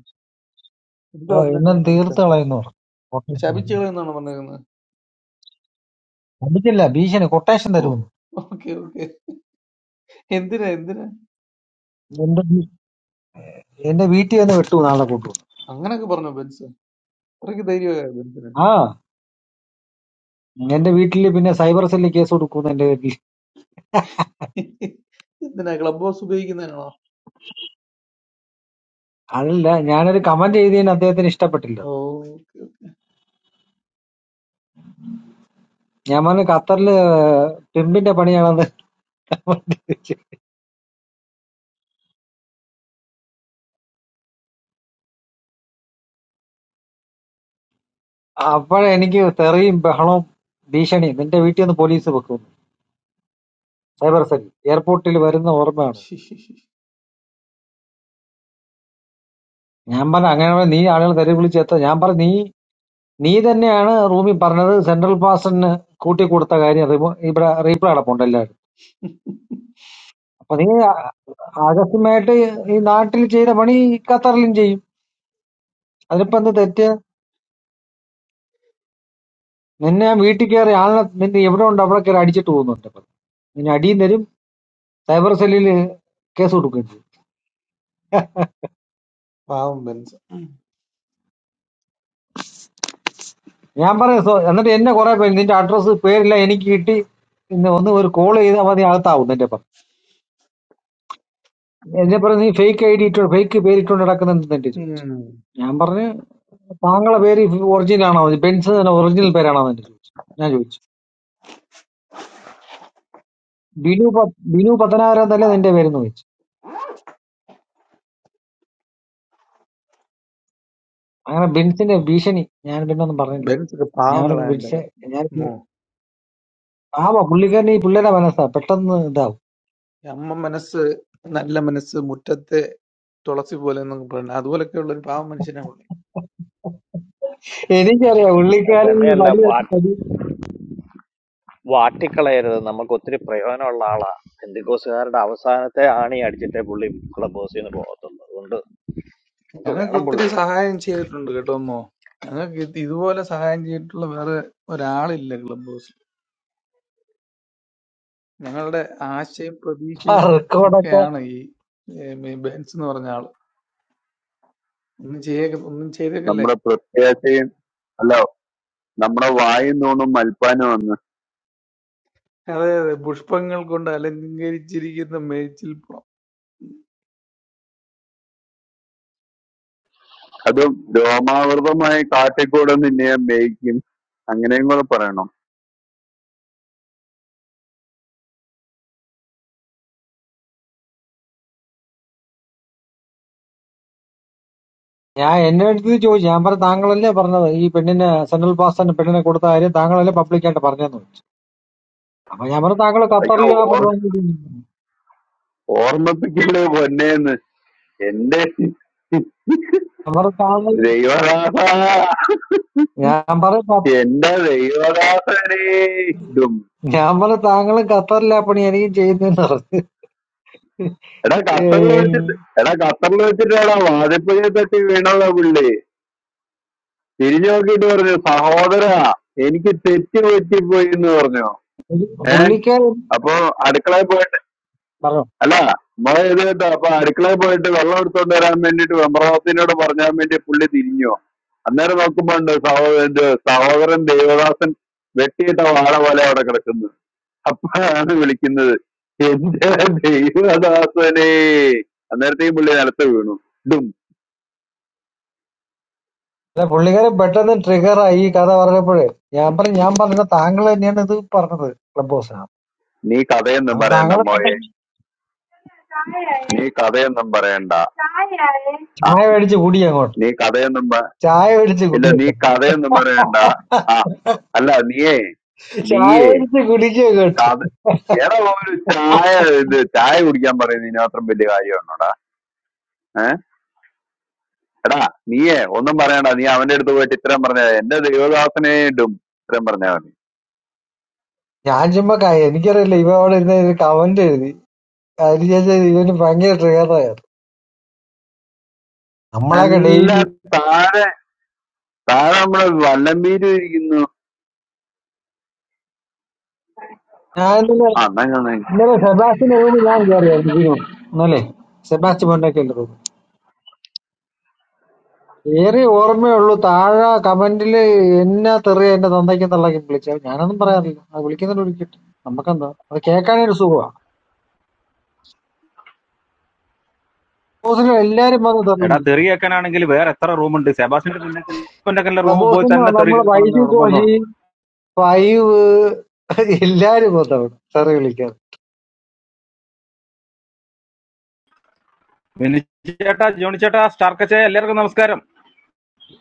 Speaker 24: എന്ത്
Speaker 23: ഓ, ഇന്ന്
Speaker 24: പറഞ്ഞിരുന്നു ബെൻസ്
Speaker 23: തീർത്ത് കളയുന്നു
Speaker 24: ശപിച്ചുകൾ എന്നാണ് പറഞ്ഞിരുന്നത്
Speaker 23: അടിക്കില്ല ഭീഷണി കൊട്ടേഷൻ
Speaker 24: ഓ
Speaker 23: തരുമെന്ന്
Speaker 24: ഓക്കെ ഓക്കെ എന്തിനാ എന്തിനാ
Speaker 23: എന്റെ വീ- എന്റെ വീട്ടിൽ വന്ന് വെട്ടു നാളെ കൊണ്ടുവന്നു
Speaker 24: അങ്ങനൊക്കെ പറഞ്ഞോ ബെൻസ് അത്രയ്ക്ക് ധൈര്യമായ ബെൻസിന്
Speaker 23: ആ എന്റെ വീട്ടിൽ പിന്നെ സൈബർ സെല്ലിൽ കേസ് കൊടുക്കുന്നു എന്റെ വീട്ടിൽ
Speaker 24: എന്തിനാ ക്ലബ് ഹൗസ് ഉപയോഗിക്കുന്നതിനാണോ
Speaker 23: അതല്ല ഞാനൊരു കമന്റ് ചെയ്തതിന് അദ്ദേഹത്തിന് ഇഷ്ടപ്പെട്ടില്ല
Speaker 24: ഓ, ഓക്കെ,
Speaker 23: ഞാൻ പറഞ്ഞു ഖത്തറില് പെമ്പിന്റെ പണിയാണെന്ന് comment ചെയ്തു. അപ്പോഴെ എനിക്ക് തെറിയും ബഹളവും ഭീഷണിയും നിന്റെ വീട്ടിൽ നിന്ന് പോലീസ് വെക്കുന്നു സൈബർ സെൽ എയർപോർട്ടിൽ വരുന്ന ഓർമ്മയാണ്
Speaker 24: ഓക്കെ.
Speaker 23: ഞാൻ പറഞ്ഞു അങ്ങനെ ആണെങ്കിൽ നീ ആളുകൾ തെറി വിളിച്ചെത്ത ഞാൻ പറഞ്ഞു നീ നീ തന്നെയാണ് റൂമിൽ പറഞ്ഞത് സെൻട്രൽ പാസ്റ്റിന് കൂട്ടി കൊടുത്ത കാര്യം റിമോ- ഇവിടെ റീപ്ലേ അടപ്പുണ്ടല്ലോ അപ്പൊ നീ ആ- ആകസ്മികമായിട്ട് ഈ നാട്ടിൽ ചെയ്ത പണി ഖത്തറിലും ചെയ്യും അതിനിപ്പോ എന്ത് തെറ്റ് നിന്നെ ഞാൻ വീട്ടിൽ കയറി ആളിനെ നിന്നെ എവിടെ ഉണ്ട് അവിടെ കയറി അടിച്ചിട്ട് പോകുന്നുണ്ട് ഇപ്പൊ. നിന്നെ അടിയും തരും സൈബർ സെല്ലിൽ കേസ് കൊടുക്കുകയും ചെയ്യും
Speaker 24: പാവം ബെൻസ് ഉം.
Speaker 23: ഞാൻ പറയാം സോ- എന്നിട്ട് എന്നെ കുറെ പേര് നിന്റെ അഡ്രസ്സ് പേരില്ല എനിക്ക് കിട്ടി ഇന്ന് ഒന്ന് ഒരു കോൾ ചെയ്താൽ മതി അകത്താവും നിന്റെ അപ്പം എന്നെ പറഞ്ഞു നീ ഫേക്ക് ഐ ഡി ഇട്ടോ ഫേക്ക് പേരിട്ടുകൊണ്ട് നടക്കുന്നെന്ന് എന്റെ ചോദിച്ചു ഞാൻ പറഞ്ഞു താങ്കളുടെ പേര് ഒറിജിനൽ ആണോ ബെൻസ് തന്നെ ഒറിജിനൽ പേരാണോ എന്നെ ചോദിച്ചു ഞാൻ ചോദിച്ചു ബിനു പ- ബിനു പത്തനാപുരം തന്നെ നിന്റെ പേരെന്ന് വിളിച്ചു അങ്ങനെ ബിൻസിന്റെ ഭീഷണി ഞാൻ പിന്നെ ഒന്നും പറഞ്ഞില്ല
Speaker 24: ബെൻസ് ഒക്കെ
Speaker 23: ഞാൻ
Speaker 24: പാവങ്ങളാ എന്റെ
Speaker 23: ബിൻസെ ഞാൻ
Speaker 24: മോ.
Speaker 23: ആവാ പുള്ളിക്കാരൻ ഈ പിള്ളേരെ മനസ്സാ പെട്ടെന്ന് ഇതാവും
Speaker 24: അമ്മ മനസ്സ് നല്ല മനസ്സ് മുറ്റത്തെ തുളസി പോലെ എന്നൊക്കെ പറഞ്ഞു അതുപോലൊക്കെ ഉള്ള ഒരു പാവം മനുഷ്യനാണ്
Speaker 23: എനിക്കറിയാം പുള്ളിക്കാരൻ ഈ
Speaker 2: തന്നെയല്ല
Speaker 23: വലിയ
Speaker 2: വാട്ട് വാട്ടിക്കളയരുത് നമുക്ക് ഒത്തിരി പ്രയോജനമുള്ള ആളാ എന്തിക്കോസുകാരുടെ അവസാനത്തെ ആണി അടിച്ചിട്ടേ പുള്ളി ക്ലബ് ഹൗസിൽ നിന്ന് പോകത്തുള്ളൂ അതുകൊണ്ട് നമുക്ക്
Speaker 24: ഞങ്ങൾക്ക്
Speaker 2: വേണം
Speaker 24: ഒത്തിരി
Speaker 2: പുള്ളി
Speaker 24: സഹായം ചെയ്തിട്ടുണ്ട് കേട്ടോ അമ്മോ ഞങ്ങൾക്ക് ഇത് ഇതുപോലെ സഹായം ചെയ്തിട്ടുള്ള വേറെ ഒരാളില്ല ക്ലബ് ഹൗസിൽ ഞങ്ങളുടെ ആശയും പ്രതീക്ഷയും
Speaker 23: റെക്കോർഡൊക്കെ
Speaker 24: ഒക്കെയാണ് ഈ ഏം, ഈ ബെൻസ് എന്ന് പറഞ്ഞ ആള് ഒന്നും ചെയ്യ ഒന്നും ചെയ്തേക്കല്ലേ
Speaker 22: നമ്മുടെ പ്രത്യാശയും അല്ല നമ്മുടെ വായും നൂണും മൽപ്പാനും ഒന്ന്
Speaker 24: അതെ അതെ പുഷ്പങ്ങൾ കൊണ്ട് അലങ്കരിച്ചിരിക്കുന്ന മേച്ചിൽ പുറം
Speaker 22: അതും രോമാവൃതമായി കാട്ടിക്കൂടെ നിന്നെ മേയ്ക്കും അങ്ങനെയും കൂടെ പറയണം
Speaker 23: ഞാൻ എന്നെ അടുത്ത് ചോദിച്ചു ഞാൻ പറഞ്ഞു താങ്കളല്ലേ പറഞ്ഞത് ഈ പെണ്ണിനെ സെൻട്രൽ പാസ്റ്റിന് പെണ്ണിനെ കൊടുത്ത കാര്യം താങ്കളല്ലേ പബ്ലിക്കായിട്ട് പറഞ്ഞതെന്ന് ചോദിച്ചു അപ്പൊ ഞാൻ പറഞ്ഞു താങ്കൾ
Speaker 22: അയ്യോ
Speaker 23: ഖത്തറിൽ ആ
Speaker 22: ഓർ
Speaker 23: പരിപാടി ചെയ്തു."
Speaker 22: ഓർമ്മിപ്പിക്കല്ലേ പൊന്നേന്ന് എന്റെ
Speaker 23: ഞാൻ പറഞ്ഞു താങ്കൾ
Speaker 22: ദൈവദാസ
Speaker 23: ഞാൻ പറഞ്ഞു "ഖ-
Speaker 22: എന്റെ ദൈവദാസനെ
Speaker 23: ഞാൻ പറഞ്ഞു താങ്കളും ഖത്തറിലെ പണി എനിക്കും ചെയ്യുന്നതെന്ന് പറഞ്ഞു
Speaker 22: എടാ ഖത്തറിൽ വെച്ചിട്ട് എടാ ഖത്തറിൽ വെച്ചിട്ടാടാ വാഴപ്പഴയെ തട്ടി വീണതാ പുള്ളി തിരിഞ്ഞു നോക്കിയിട്ട് പറഞ്ഞു സഹോദരാ എനിക്ക് തെറ്റ് പറ്റിപ്പോയി എന്ന് പറഞ്ഞു ഏ
Speaker 23: പുള്ളിക്കാരൻ
Speaker 22: അപ്പൊ അടുക്കളയിൽ പോയിട്ട്
Speaker 23: പറഞ്ഞു
Speaker 22: അല്ല മഴ ഇത് കേട്ടോ അപ്പൊ അടുക്കളയിൽ പോയിട്ട് വെള്ളം എടുത്തോണ്ട് വരാൻ വേണ്ടിട്ട് വെമ്പ്രവാസിനോട് പറഞ്ഞാൻ വേണ്ടി പുള്ളി തിരിഞ്ഞു അന്നേരം നോക്കുമ്പോ ഉണ്ട് സഹോദരൻ സഹോദരൻ ദേവദാസൻ വെട്ടിയിട്ട വാഴ പോലെ അവിടെ കിടക്കുന്നു അപ്പോഴാണ് വിളിക്കുന്നത് എന്റെ ദൈവദാസനെ അന്നേരത്തെ ഈ പുള്ളി നിലത്ത് വീണു ഇതും
Speaker 23: അല്ല പുള്ളിക്കാരൻ പെട്ടെന്ന് ട്രിഗർ ആയി ഈ കഥ പറഞ്ഞപ്പോഴേ ഞാൻ പറഞ്ഞു ഞാൻ പറഞ്ഞ താങ്കൾ തന്നെയാണ് ഇത് പറഞ്ഞത് ക്ലബ് ഹൗസിനകത്ത്
Speaker 22: നീ കഥയൊന്നും
Speaker 23: അപ്പൊ
Speaker 22: പറയണ്ട
Speaker 23: താങ്കൾ
Speaker 22: മോയെ
Speaker 23: പെട്ടെന്ന്
Speaker 22: നീ കഥയൊന്നും പറയണ്ട ആ
Speaker 23: ചായ മേടിച്ച് കുടി അങ്ങോട്ട്
Speaker 22: നീ കഥയൊന്നും പ-
Speaker 23: ചായ മേടിച്ച്
Speaker 22: ഇല്ല
Speaker 23: കുടി
Speaker 22: നീ
Speaker 23: അങ്ങോട്ട്.
Speaker 22: കഥയൊന്നും പറയണ്ട ആ അല്ല നീയേ
Speaker 23: ചായ
Speaker 22: നീയേ
Speaker 23: മേടിച്ച് കുടിക്കുക അങ്ങോട്ട്
Speaker 22: കഥ എടാ ഒരു ചായ ഇത് ചായ കുടിക്കാൻ പറയുന്നത് ഇനി മാത്രം വലിയ കാര്യമാണോടാ ഏഹ് എടാ നീയേ ഒന്നും പറയണ്ട നീ അവന്റെ അടുത്ത് പോയിട്ട് ഇത്രയും പറഞ്ഞ എന്റെ ദൈവദാസനെ ഇടും ഇത്രയും പറഞ്ഞാൽ മതി
Speaker 23: ഞാൻ ചുമ്മാ കാര്യം എനിക്കറിയില്ല ഇവ അവിടെ ഇരുന്ന് ഒരു കമന്റ് എഴുതി അതിന് ശേഷം ഇവന് ഭയങ്കര ട്രിഗറായിരുന്നു നമ്മളൊക്കെ
Speaker 22: അല്ല
Speaker 23: ഡെയിലി
Speaker 22: താഴെ താഴെ നമ്മുടെ വല്ലമ്പേര് ഇരിക്കുന്നു
Speaker 23: ഞാൻ ഇന്നലെ
Speaker 22: ആ എന്നാ ചെന്നേ
Speaker 23: ഇന്നലെ സെബാസ്റ്റിന്റെ റൂമിൽ ഞാൻ കയറിയായിരുന്നു ഇതിനു മുമ്പ്. ഇന്നലെ സെബാസ്റ്റി മൊന്നൊക്കെ ഏറെ ഓർമ്മയുള്ളൂ താഴെ കമന്റില് എന്നാ തെറിയ എന്റെ തന്തയ്ക്ക് തള്ളക്കും വിളിച്ചത് ഞാനൊന്നും പറയാറില്ല അത് വിളിക്കുന്നുണ്ട് വിളിക്കട്ടെ നമുക്കെന്താ അത് കേൾക്കാനേ ഒരു സുഖമാ ക്ലബ് ഹൗസിൽ എല്ലാരും വന്ന്
Speaker 26: എടാ
Speaker 23: തെറിഞ്ഞു
Speaker 26: തെറി കേൾക്കാനാണെങ്കിൽ വേറെ എത്ര റൂമുണ്ട് സെബാസിന്റെ മുന്നേക്കല്ല
Speaker 23: ക്ലബ്
Speaker 26: റൂമിൽ പോയി
Speaker 23: ഹൗസിൽ
Speaker 26: തന്നെ
Speaker 23: നിന്ന്
Speaker 26: തെറി
Speaker 23: നമ്മള്
Speaker 26: കേൾക്കണമെന്ന്
Speaker 23: വൈദ്യു കോശി
Speaker 26: നിർബന്ധമുണ്ട്
Speaker 23: ഫൈവ് എല്ലാരും വന്നവിടെ തെറി വിളിക്കാൻ
Speaker 26: ബിനു ചേട്ടാ ജോണി ചേട്ടാ സ്റ്റാർക്കച്ച എല്ലാവർക്കും നമസ്കാരം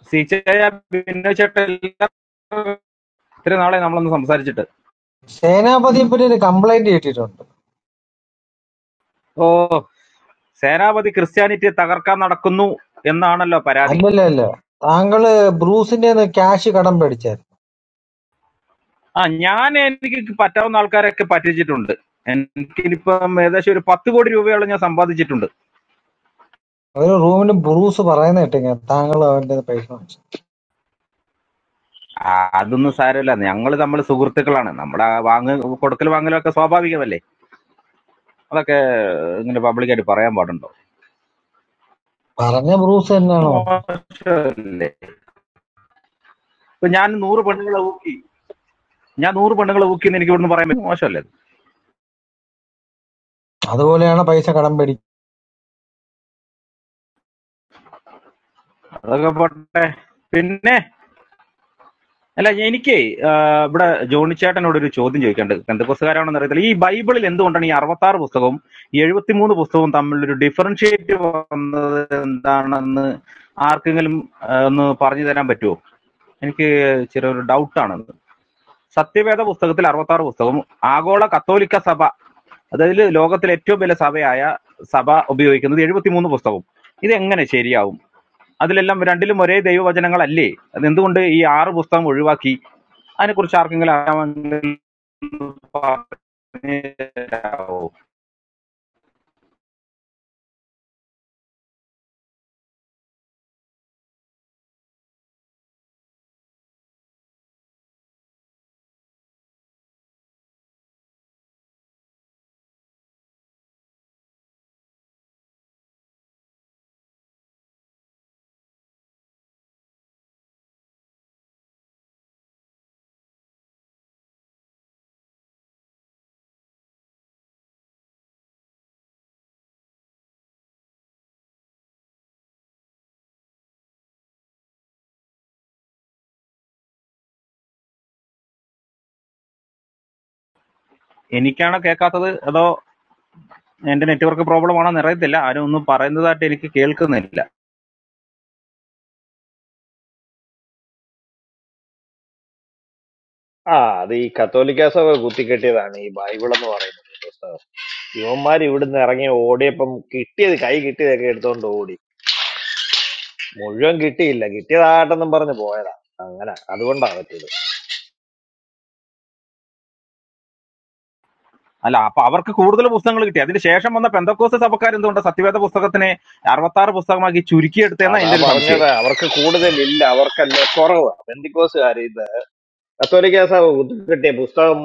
Speaker 26: സീച്ചയ ബിനു ചേട്ട എല്ലാവർക്കും ഇത്രയും നാളെ നമ്മളൊന്ന് സംസാരിച്ചിട്ട്
Speaker 23: സേനാപതിയെ പറ്റി ഒരു കംപ്ലൈന്റ് കിട്ടിയിട്ടുണ്ട്
Speaker 26: ഓ സേനാപതി ക്രിസ്ത്യാനിറ്റി തകർക്കാൻ നടക്കുന്നു എന്നാണല്ലോ പരാതി
Speaker 23: അല്ലല്ല അല്ല താങ്കള് ബ്രൂസിന്റെ ക്യാഷ് കടം പേടിച്ചായിരുന്നു
Speaker 26: ആ ഞാൻ എനിക്ക് പറ്റാവുന്ന ആൾക്കാരൊക്കെ പറ്റിച്ചിട്ടുണ്ട് എനിക്കിപ്പം ഏകദേശം ഒരു പത്ത് കോടി രൂപയോളം ഞാൻ സമ്പാദിച്ചിട്ടുണ്ട്
Speaker 23: ഒരു റൂമിന് ബ്രൂസ് പറയുന്ന കേട്ടിങ്ങനെ താങ്കൾ അവന്റെ പൈസ വാങ്ങിച്ചു
Speaker 26: ആ, അതൊന്നും സാരമില്ല ഞങ്ങൾ നമ്മൾ സുഹൃത്തുക്കളാണ് നമ്മുടെ ആ വാങ്ങ കൊടുക്കൽ വാങ്ങലൊക്കെ സ്വാഭാവികമല്ലേ ഇങ്ങനെ പബ്ലിക്കായിട്ട് പറയാൻ പാടുണ്ടോ
Speaker 23: പറഞ്ഞ ബ്രൂസ് തന്നെയാണോ
Speaker 26: മോശമല്ലേ ഇപ്പൊ ഞാൻ നൂറ് പെണ്ണുങ്ങളെ ഊക്കി ഞാൻ നൂറ് പെണ്ണുങ്ങളെ ഊക്കി എന്ന് എനിക്ക് ഇവിടുന്ന് പറയാൻ പറ്റും മോശമല്ലേ
Speaker 23: അതുപോലെയാണ് പൈസ കടം പേടിക്കുന്നത്
Speaker 26: അതൊക്കെ പോട്ടെ പിന്നെ അല്ല എനിക്ക് ഇവിടെ ജോണിച്ചേട്ടനോട് ഒരു ചോദ്യം ചോദിക്കേണ്ടത് എന്തൊക്കെസ്കാരാണെന്ന് അറിയത്തില്ല ഈ ബൈബിളിൽ എന്തുകൊണ്ടാണ് ഈ അറുപത്തി ആറ് പുസ്തകവും ഈ എഴുപത്തിമൂന്ന് പുസ്തകവും തമ്മിലൊരു ഡിഫറൻഷിയേറ്റ് വന്നത് എന്താണെന്ന് ആർക്കെങ്കിലും ആ, ഒന്ന് പറഞ്ഞു തരാൻ പറ്റുമോ എനിക്ക് ചെറിയൊരു ഡൗട്ടാണത് സത്യവേദ പുസ്തകത്തിൽ അറുപത്തി ആറ് പുസ്തകവും ആഗോള കത്തോലിക്ക സഭ അതായത് ലോകത്തിലെ ഏറ്റവും വലിയ സഭയായ സഭ ഉപയോഗിക്കുന്നത് എഴുപത്തിമൂന്ന് പുസ്തകവും ഇത് എങ്ങനെ ശരിയാവും അതിലെല്ലാം രണ്ടിലും ഒരേ ദൈവവചനങ്ങളല്ലേ അത് എന്തുകൊണ്ട് ഈ ആറ് പുസ്തകം ഒഴിവാക്കി അതിനെക്കുറിച്ച് ആർക്കെങ്കിലും അറിയാമെങ്കിൽ പറഞ്ഞുതരാമോ? എനിക്കാണോ കേൾക്കാത്തത് അതോ എന്റെ നെറ്റ്വർക്ക് പ്രോബ്ലം ആണോ അറിയത്തില്ല ആരും ഒന്നും പറയുന്നതായിട്ട് എനിക്ക് കേൾക്കുന്നില്ല
Speaker 2: ആ അത് ഈ കത്തോലിക്ക സഭ കുത്തിക്കെട്ടിയതാണ് ഈ ബൈബിൾ എന്ന് പറയുന്നത് ഈ പുസ്തകം യുവന്മാർ ഇവിടുന്ന് ഇറങ്ങി ഓടിയപ്പം കിട്ടിയത് കൈ കിട്ടിയതൊക്കെ എടുത്തോണ്ട് ഓടി മുഴുവൻ കിട്ടിയില്ല കിട്ടിയതാകട്ടെന്നും പറഞ്ഞ് പോയതാ അങ്ങനെ അതുകൊണ്ടാ പറ്റിയത്
Speaker 26: അല്ല അപ്പൊ അവർക്ക് കൂടുതൽ പുസ്തകങ്ങൾ കിട്ടി അതിന് ശേഷം വന്ന പെന്തക്കോസ് സഭക്കാർ എന്തുകൊണ്ട് സത്യവേദ പുസ്തകത്തിനെ അറുപത്തി ആറ് പുസ്തകമാക്കി ചുരുക്കിയെടുത്തേന്നാ
Speaker 2: അതാ
Speaker 26: എന്റെ ഒരു സംശയം
Speaker 2: പറഞ്ഞത് അവർക്ക് കൂടുതലില്ല അവർക്കല്ല കുറവ് ബന്ധിക്കോസുകാർ ഇത് കത്തോലിക്ക സഭ കുത്തിക്കെട്ടിയ പുസ്തകം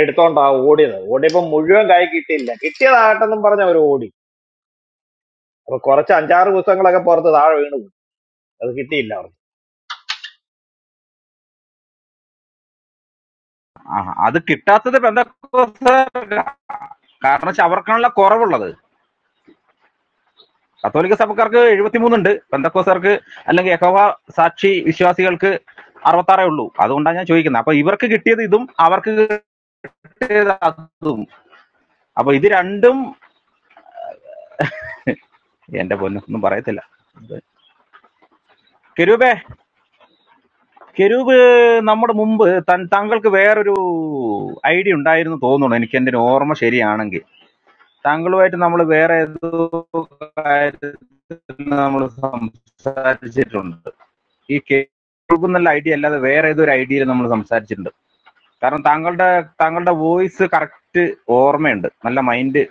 Speaker 2: എടുത്തോണ്ടാ ഓടിയത് ഓടിയപ്പോ മുഴുവൻ കൈ കിട്ടിയില്ല കിട്ടിയതാകട്ടെന്നും പറഞ്ഞ് അവർ ഓടി അപ്പൊ കുറച്ച് അഞ്ചാറ് പുസ്തകങ്ങളൊക്കെ പുറത്ത് താഴെ വീണു അത് കിട്ടിയില്ല അവർക്ക്
Speaker 26: ആ അത് കിട്ടാത്തത് പെന്തക്കോസ്തർക്കാ. കാരണം വെച്ചാൽ അവർക്കാണല്ലോ കുറവുള്ളത് കത്തോലിക്ക സഭക്കാർക്ക് എഴുപത്തിമൂന്നുണ്ട് പെന്തക്കോസ്തർക്ക് അല്ലെങ്കിൽ യഹോവ സാക്ഷി വിശ്വാസികൾക്ക് അറുപത്താറേ ഉള്ളൂ അതുകൊണ്ടാണ് ഞാൻ ചോദിക്കുന്നത് അപ്പൊ ഇവർക്ക് കിട്ടിയത് ഇതും അവർക്ക് കിട്ടിയത് അതും അപ്പൊ ഇത് രണ്ടും എന്റെ പൊന്നു ഒന്നും പറയത്തില്ല കെരൂബേ കെരൂബ് നമ്മുടെ മുമ്പ് തൻ- താങ്കൾക്ക് വേറൊരു ഐഡിയ ഉണ്ടായിരുന്നു തോന്നുന്നു എനിക്ക് എന്റെ ഒരു ഓർമ്മ ശരിയാണെങ്കിൽ താങ്കളുമായിട്ട് നമ്മൾ വേറെ ഏതോ കാര്യത്തിൽ നമ്മൾ സംസാരിച്ചിട്ടുണ്ട് ഈ കേൾക്കും എന്നുള്ള ഐഡിയ അല്ലാതെ വേറെ ഏതോ ഒരു ഐഡിയയിൽ നമ്മൾ സംസാരിച്ചിട്ടുണ്ട് കാരണം താങ്കളുടെ താങ്കളുടെ വോയിസ് കറക്റ്റ് ഓർമ്മയുണ്ട് നല്ല മൈൻഡ്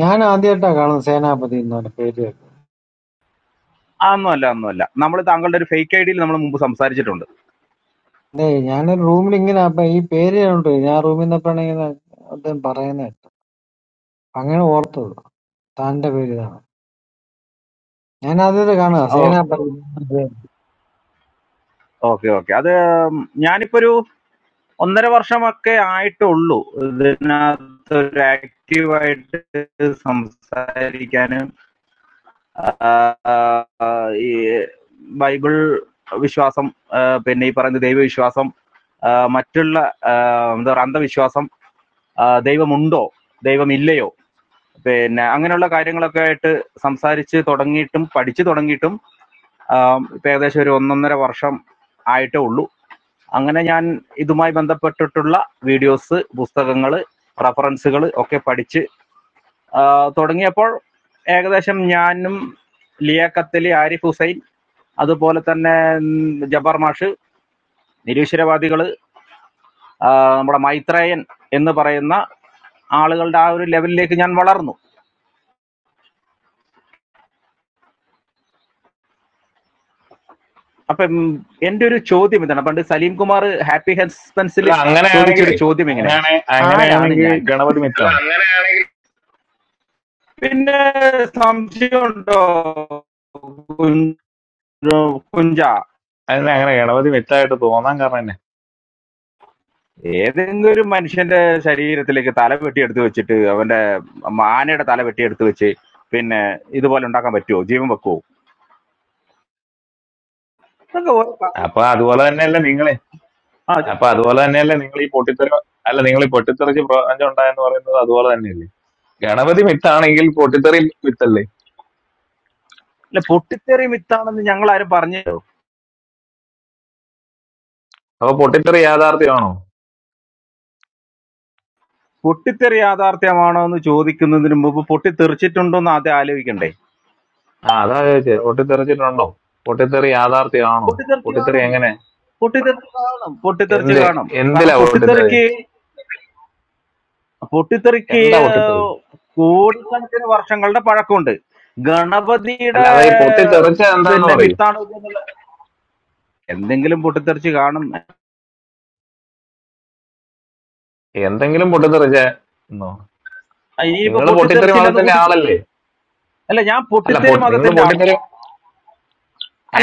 Speaker 23: ഞാൻ ആദ്യമായിട്ടാ കാണുന്നത് സേനാപതി എന്ന് പറഞ്ഞ പേര് കേട്ടത്.
Speaker 26: അതൊന്നും അല്ല ഒന്നും അല്ല നമ്മൾ താങ്കളുടെ ഒരു ഫേക്ക് ഐഡിയയിൽ നമ്മൾ മുമ്പ് സംസാരിച്ചിട്ടുണ്ട്
Speaker 23: അതെ ഞാനൊരു റൂമിൽ ഇങ്ങനെ അപ്പൊ ഈ പേര് കണ്ടു ഞാൻ റൂമിൽ നിന്നപ്പോഴാണ് ഇങ്ങനെ അദ്ദേഹം പറയുന്നത് കേട്ടത്. അങ്ങനെ ഓർത്തത് താന്റെ പേര് ഇതാണ് ഞാൻ ആദ്യമായിട്ട് കാണുക സേനാപതി
Speaker 26: ഓക്കെ ഓക്കെ അത് ഞാനിപ്പോ ഒരു ഒന്നര വർഷമൊക്കെ ആയിട്ടുള്ളൂ ഇതിനകത്ത് ഒരു ആക്റ്റീവായിട്ട് സംസാരിക്കാനും ഈ ബൈബിൾ വിശ്വാസം ആ, പിന്നെ ഈ പറയുന്ന ദൈവവിശ്വാസം ആ, മറ്റുള്ള ആ, എന്താ പറയുക അന്ധവിശ്വാസം ആ, ദൈവമുണ്ടോ ദൈവമില്ലയോ പിന്നെ അങ്ങനെയുള്ള കാര്യങ്ങളൊക്കെ ആയിട്ട് സംസാരിച്ച് തുടങ്ങിയിട്ടും പഠിച്ചു തുടങ്ങിയിട്ടും ആ, ഇപ്പൊ ഏകദേശം ഒരു ഒന്നൊന്നര വർഷം ആയിട്ടേ ഉള്ളൂ അങ്ങനെ ഞാൻ ഇതുമായി ബന്ധപ്പെട്ടിട്ടുള്ള വീഡിയോസ് പുസ്തകങ്ങൾ റഫറൻസുകൾ ഒക്കെ പഠിച്ച് ആ, തുടങ്ങിയപ്പോൾ ഏകദേശം ഞാനും ലിയ കത്തലി ആരിഫ് ഹുസൈൻ അതുപോലെ തന്നെ ഉം, ജബ്ബാർ മാഷ് നിരീശ്വരവാദികള് ആ, നമ്മുടെ മൈത്രേയൻ എന്ന് പറയുന്ന ആളുകളുടെ ആ ഒരു ലെവലിലേക്ക് ഞാൻ വളർന്നു അപ്പം എന്റെ ഒരു ചോദ്യം ഇതാണ് പണ്ട് സലീം കുമാർ ഹാപ്പി ഹെസ്പെൻസിൽ
Speaker 27: അല്ല
Speaker 26: ചോദിച്ചൊരു
Speaker 27: അങ്ങനെയാണെങ്കിലേ
Speaker 26: ചോദ്യം ഇങ്ങനെ
Speaker 27: അങ്ങനെയാണെ
Speaker 26: ആരാണ്
Speaker 27: അങ്ങനെയാണെങ്കിൽ
Speaker 26: ഞാൻ
Speaker 27: ഗണപതി
Speaker 26: അല്ല
Speaker 27: മിത്താണ്
Speaker 26: അങ്ങനെ പിന്നെ സംശയമുണ്ടോ കുഞ്ച- കുഞ്ച
Speaker 27: അതിന് അങ്ങനെ ഗണപതി മിത്തായിട്ട് തോന്നാൻ കാരണം തന്നെ
Speaker 26: ഏതെങ്കിലും ഒരു മനുഷ്യന്റെ ശരീരത്തിലേക്ക് തല വെട്ടിയെടുത്ത് വെച്ചിട്ട് അവന്റെ ആനയുടെ തല വെട്ടിയെടുത്ത് വെച്ച് പിന്നെ ഇതുപോലെ ഉണ്ടാക്കാൻ പറ്റുമോ ജീവൻ വെക്കുവോ
Speaker 27: അപ്പൊ അതുപോലെ തന്നെയല്ലേ നിങ്ങളെ
Speaker 26: ആ
Speaker 27: അപ്പൊ അതുപോലെ തന്നെയല്ലേ നിങ്ങൾ ഈ പൊട്ടിത്തെറി അല്ല നിങ്ങൾ ഈ പൊട്ടിത്തെറിച്ച് പ്രപഞ്ചം ഉണ്ടായെന്ന് പറയുന്നത് അതുപോലെ തന്നെയല്ലേ ഗണപതി മിത്താണെങ്കിൽ പൊട്ടിത്തെറി മിത്തല്ലേ
Speaker 26: അല്ല പൊട്ടിത്തെറി മിത്താണെന്ന് ഞങ്ങൾ ആരും പറഞ്ഞു
Speaker 27: അപ്പൊ പൊട്ടിത്തെറി യാഥാർത്ഥ്യമാണോ
Speaker 26: പൊട്ടിത്തെറി യാഥാർത്ഥ്യമാണോ എന്ന് ചോദിക്കുന്നതിന് മുമ്പ് പൊട്ടിത്തെറിച്ചിട്ടുണ്ടോ എന്ന് ആദ്യം ആലോചിക്കണ്ടേ
Speaker 27: ആ അതാ ചോദിച്ചത് പൊട്ടിത്തെറിച്ചിട്ടുണ്ടോ പൊട്ടിത്തെറി യാഥാർത്ഥ്യമാണോ
Speaker 26: പൊട്ടിത്തെറിച്ച്
Speaker 27: പൊട്ടിത്തെറി
Speaker 26: കാണും
Speaker 27: എങ്ങനെ
Speaker 26: പൊട്ടിത്തെറി പൊട്ടിത്തെറിച്ച്
Speaker 27: എന്ത്
Speaker 26: കാണും കാരണം
Speaker 27: എന്തിലാ പൊട്ടിത്തെറി
Speaker 26: പൊട്ടിത്തെറിക്ക് പൊട്ടിത്തെറിക്ക്
Speaker 27: എന്താ പൊട്ടിത്തെറി
Speaker 26: ഏഹ്, കോടിക്കണക്കിന് വർഷങ്ങളുടെ പഴക്കമുണ്ട്
Speaker 27: അല്ല
Speaker 26: ഗണപതിയുടെ
Speaker 27: അതാ ഈ
Speaker 26: ഏഹ്,
Speaker 27: പൊട്ടിത്തെറിച്ച എന്താന്ന്
Speaker 26: പിന്നെ
Speaker 27: പറയൂ
Speaker 26: മിത്താണ് ഇത്. എന്തെങ്കിലും പൊട്ടിത്തെറിച്ച് കാണും
Speaker 27: എന്തെങ്കിലും പൊട്ടിത്തെറിച്ച
Speaker 26: ആ, ഇനിയിപ്പോ
Speaker 27: നിങ്ങൾ പൊട്ടിത്തെറി
Speaker 26: പൊട്ടിത്തെറിച്ചില്ല എന്ന്
Speaker 27: മതത്തിന്റെ
Speaker 26: കൂട്ടിക്കും
Speaker 27: ആളല്ലേ
Speaker 26: അല്ല ഞാൻ
Speaker 27: അല്ല
Speaker 26: പൊട്ടിത്തെറി
Speaker 27: പൊ- നിങ്ങൾ
Speaker 26: മതത്തിന്റെ ആളല്ല
Speaker 27: പൊട്ടിത്തെറി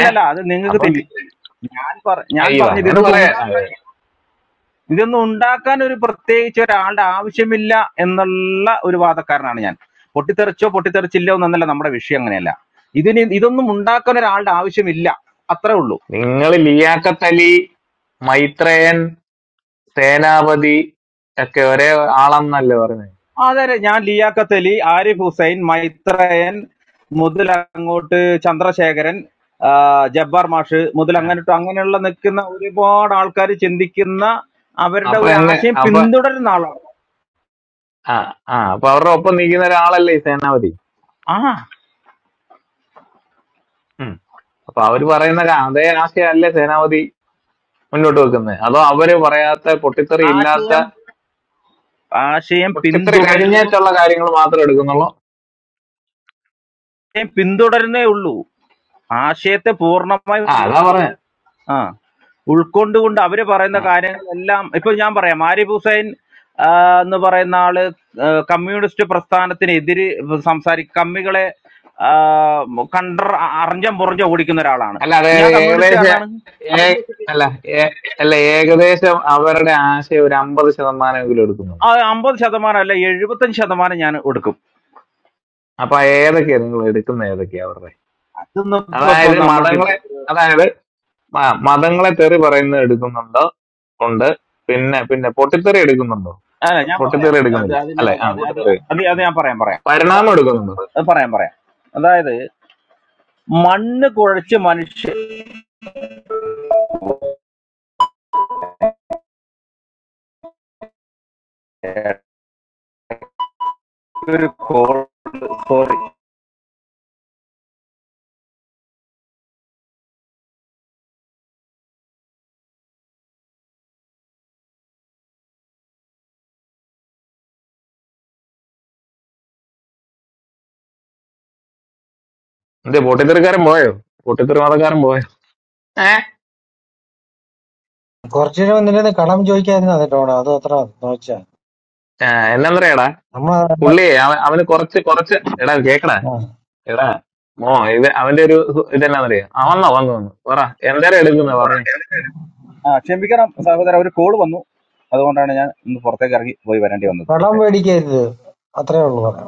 Speaker 27: ഏ
Speaker 26: അത് നിങ്ങൾക്ക്
Speaker 27: അപ്പൊ
Speaker 26: തെറ്റി
Speaker 27: ലി-
Speaker 26: ഞാൻ പറ ഞാൻ
Speaker 27: അയ്യോ
Speaker 26: പറഞ്ഞത് ഇതൊന്നും
Speaker 27: അങ്ങനെ
Speaker 26: ഉണ്ടാവില്ല
Speaker 27: പറയാ
Speaker 26: ഇതൊന്നും ഉണ്ടാക്കാൻ ഒരു പ്രത്യേകിച്ച് ഒരാളുടെ ആവശ്യമില്ല എന്നുള്ള ഒരു വാദക്കാരനാണ് ഞാൻ പൊട്ടിത്തെറിച്ചോ പൊട്ടിത്തെറിച്ചില്ലോ എന്നല്ല നമ്മുടെ വിഷയം അങ്ങനെയല്ല ഇതിന് ഇതൊന്നും ഉണ്ടാക്കാൻ ഒരാളുടെ ആവശ്യമില്ല അത്രേ ഉള്ളൂ
Speaker 27: നിങ്ങൾ ലിയാക്കത്തലി മൈത്രേയൻ സേനാപതി ഒക്കെ ഒരേ ആളെന്നല്ലേ പറഞ്ഞത്
Speaker 26: അതെ ഞാൻ ലിയാഖത്ത് അലി ആരിഫ് ഹുസൈൻ മൈത്രയൻ മുതൽ അങ്ങോട്ട് ചന്ദ്രശേഖരൻ ആ, ജബ്ബാർ മാഷ് മുതൽ
Speaker 27: ആ.
Speaker 26: അങ്ങോട്ട് അങ്ങനെയുള്ള നിൽക്കുന്ന ഒരുപാട് ആൾക്കാർ ചിന്തിക്കുന്ന അവരുടെ
Speaker 27: അപ്പൊ
Speaker 26: ഒരു
Speaker 27: എങ്ങ
Speaker 26: ആശയം
Speaker 27: അപ്പൊ
Speaker 26: പിന്തുടരുന്ന ആളാണ്
Speaker 27: ആ ആ അപ്പൊ അവരുടെ ഒപ്പം നിൽക്കുന്ന ഒരാളല്ലേ ഈ സേനാപതി
Speaker 26: ആ
Speaker 27: ഉം. അപ്പൊ അവര് പറയുന്ന ക- അതേ ആശയമല്ലേ സേനാപതി മുന്നോട്ട് വെക്കുന്നത് അതോ അവര് പറയാത്ത പൊട്ടിത്തെറി ഇല്ലാത്ത
Speaker 26: ആശയം ആശയം
Speaker 27: പൊട്ടിത്തെറി
Speaker 26: പിന്തുടരുന്നു
Speaker 27: കഴിഞ്ഞേറ്റുള്ള കാര്യങ്ങൾ മാത്രം എടുക്കുന്നുള്ളൂ
Speaker 26: പിന്തുടരുന്നേ ഉള്ളൂ ആശയത്തെ പൂർണ്ണമായി
Speaker 27: ആ അതാ പറഞ്ഞത്
Speaker 26: ആ ഉൾക്കൊണ്ടുകൊണ്ട് അവര് പറയുന്ന കാര്യങ്ങളെല്ലാം ഇപ്പൊ ഞാൻ പറയാം ആരിഫ് ഹുസൈൻ ആ, എന്ന് പറയുന്ന ആള് ആ, കമ്മ്യൂണിസ്റ്റ് പ്രസ്ഥാനത്തിനെതിര് സംസാരി കമ്മികളെ ആ, കണ്ടർ അറിഞ്ഞം പുറഞ്ഞം ഓടിക്കുന്ന ഒരാളാണ്
Speaker 27: അല്ല അതായത്
Speaker 26: ഞാൻ
Speaker 27: ഏകദേശം
Speaker 26: കമ്മ്യൂണിസ്റ്റുകാരനാണ് അപ്പൊ
Speaker 27: ഏ അല്ല ഏ അല്ല ഏകദേശം അവരുടെ ആശയം ഒരു അമ്പത് ശതമാനമെങ്കിലും
Speaker 26: ആ
Speaker 27: എടുക്കുന്നുള്ളൂ
Speaker 26: അമ്പത് ശതമാനം അല്ല എഴുപത്തഞ്ച് ശതമാനം ഞാൻ എടുക്കും
Speaker 27: അപ്പൊ ഏതൊക്കെയാ നിങ്ങൾ എടുക്കുന്ന ഏതൊക്കെയാ അവരുടെ
Speaker 26: അതൊന്നും ഇപ്പൊ ഇപ്പൊ
Speaker 27: അതായത്
Speaker 26: നമ്മൾക്ക് ഇപ്പൊ-
Speaker 27: മതങ്ങളെ അതായത് മ- മതങ്ങളെ തെറി പറയുന്നത് എടുക്കുന്നുണ്ടോ ഉണ്ട് പിന്നെ പിന്നെ പൊട്ടിത്തെറി എടുക്കുന്നുണ്ടോ
Speaker 26: അല്ല ഞാൻ പറയാം
Speaker 27: പൊട്ടിത്തെറി
Speaker 26: അത്
Speaker 27: എടുക്കുന്നില്ല
Speaker 26: അതിന്
Speaker 27: അല്ലെ
Speaker 26: അത്
Speaker 27: ആ
Speaker 26: അത്
Speaker 27: പൊട്ടിത്തെറി
Speaker 26: അത് അത്
Speaker 27: ഉം.
Speaker 26: ഞാൻ പറയാം പറയാം
Speaker 27: പരിണാമം എടുക്കുന്നുണ്ടോ
Speaker 26: അത് പറയാം പറയാം അതായത് മണ്ണ് കുഴച്ച് മനുഷ്യ ഒരു കോൾ സോറി
Speaker 27: എന്തേ പൊട്ടിത്തെറിക്കാരൻ പോയോ പൊട്ടിത്തെറി മതക്കാരൻ പോയോ ഏഹ്
Speaker 23: കുറച്ചുകൂടെ നിന്നെ കടം ചോദിക്കാതിരുന്ന കേട്ടോ അത് അത്ര നോച്ചാ
Speaker 27: എന്നാ പറയാടാ
Speaker 23: നമ്മൾ
Speaker 27: പുള്ളിയെ അവ- അവന് കുറച്ച് കുറച്ച് എടാ കേക്കടാ എടാ മോ ഇത് അവന്റെ ഒരു ഹു- ഇതെന്നാന്നറിയോ ആ വന്നോ വന്നു വന്നു പറ എന്തേരം എടുക്കുന്ന പറഞ്ഞേ
Speaker 26: ആ ക്ഷമിക്കണം സഹോദര ഒരു കോള് വന്നു അതുകൊണ്ടാണ് ഞാൻ ഒന്ന് പുറത്തേക്ക് ഇറങ്ങി പോയി വരേണ്ടി വന്നത്
Speaker 23: കടം
Speaker 26: ഓക്കെ
Speaker 23: മേടിക്കരുത് അത്രേ ഉള്ളു പറയാം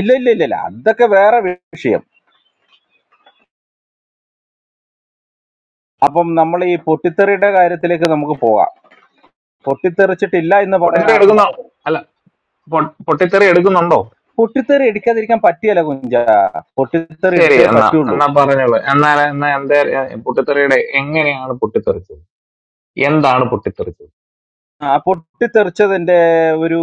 Speaker 26: ഇല്ല ഇല്ല ഇല്ല ഇല്ല അതൊക്കെ വേറെ വിഷയം അപ്പം നമ്മൾ ഈ പൊട്ടിത്തെറിയുടെ കാര്യത്തിലേക്ക് നമുക്ക് പോകാം പൊട്ടിത്തെറിച്ചിട്ടില്ല എന്ന് പറയാൻ
Speaker 27: പൊട്ടിത്തെറി
Speaker 26: ആർക്കും
Speaker 27: എടുക്കുന്നോ
Speaker 26: പറ്റില്ല
Speaker 27: അല്ല പൊ- പൊട്ടിത്തെറി എടുക്കുന്നുണ്ടോ
Speaker 26: പൊട്ടിത്തെറി എടുക്കാതിരിക്കാൻ പറ്റിയല്ല കുഞ്ച പൊട്ടിത്തെറി
Speaker 27: ശരി
Speaker 26: എടുത്തേ
Speaker 27: എന്നാ
Speaker 26: പറ്റുള്ളൂ
Speaker 27: എന്നാ പറഞ്ഞോളൂ എന്നാ എന്നാ എന്താ പൊട്ടിത്തെറിയുടെ എങ്ങനെയാണ് പൊട്ടിത്തെറിച്ചത് എന്താണ് പൊട്ടിത്തെറിച്ചത്
Speaker 26: ആ പൊട്ടിത്തെറിച്ചതിന്റെ ഒരു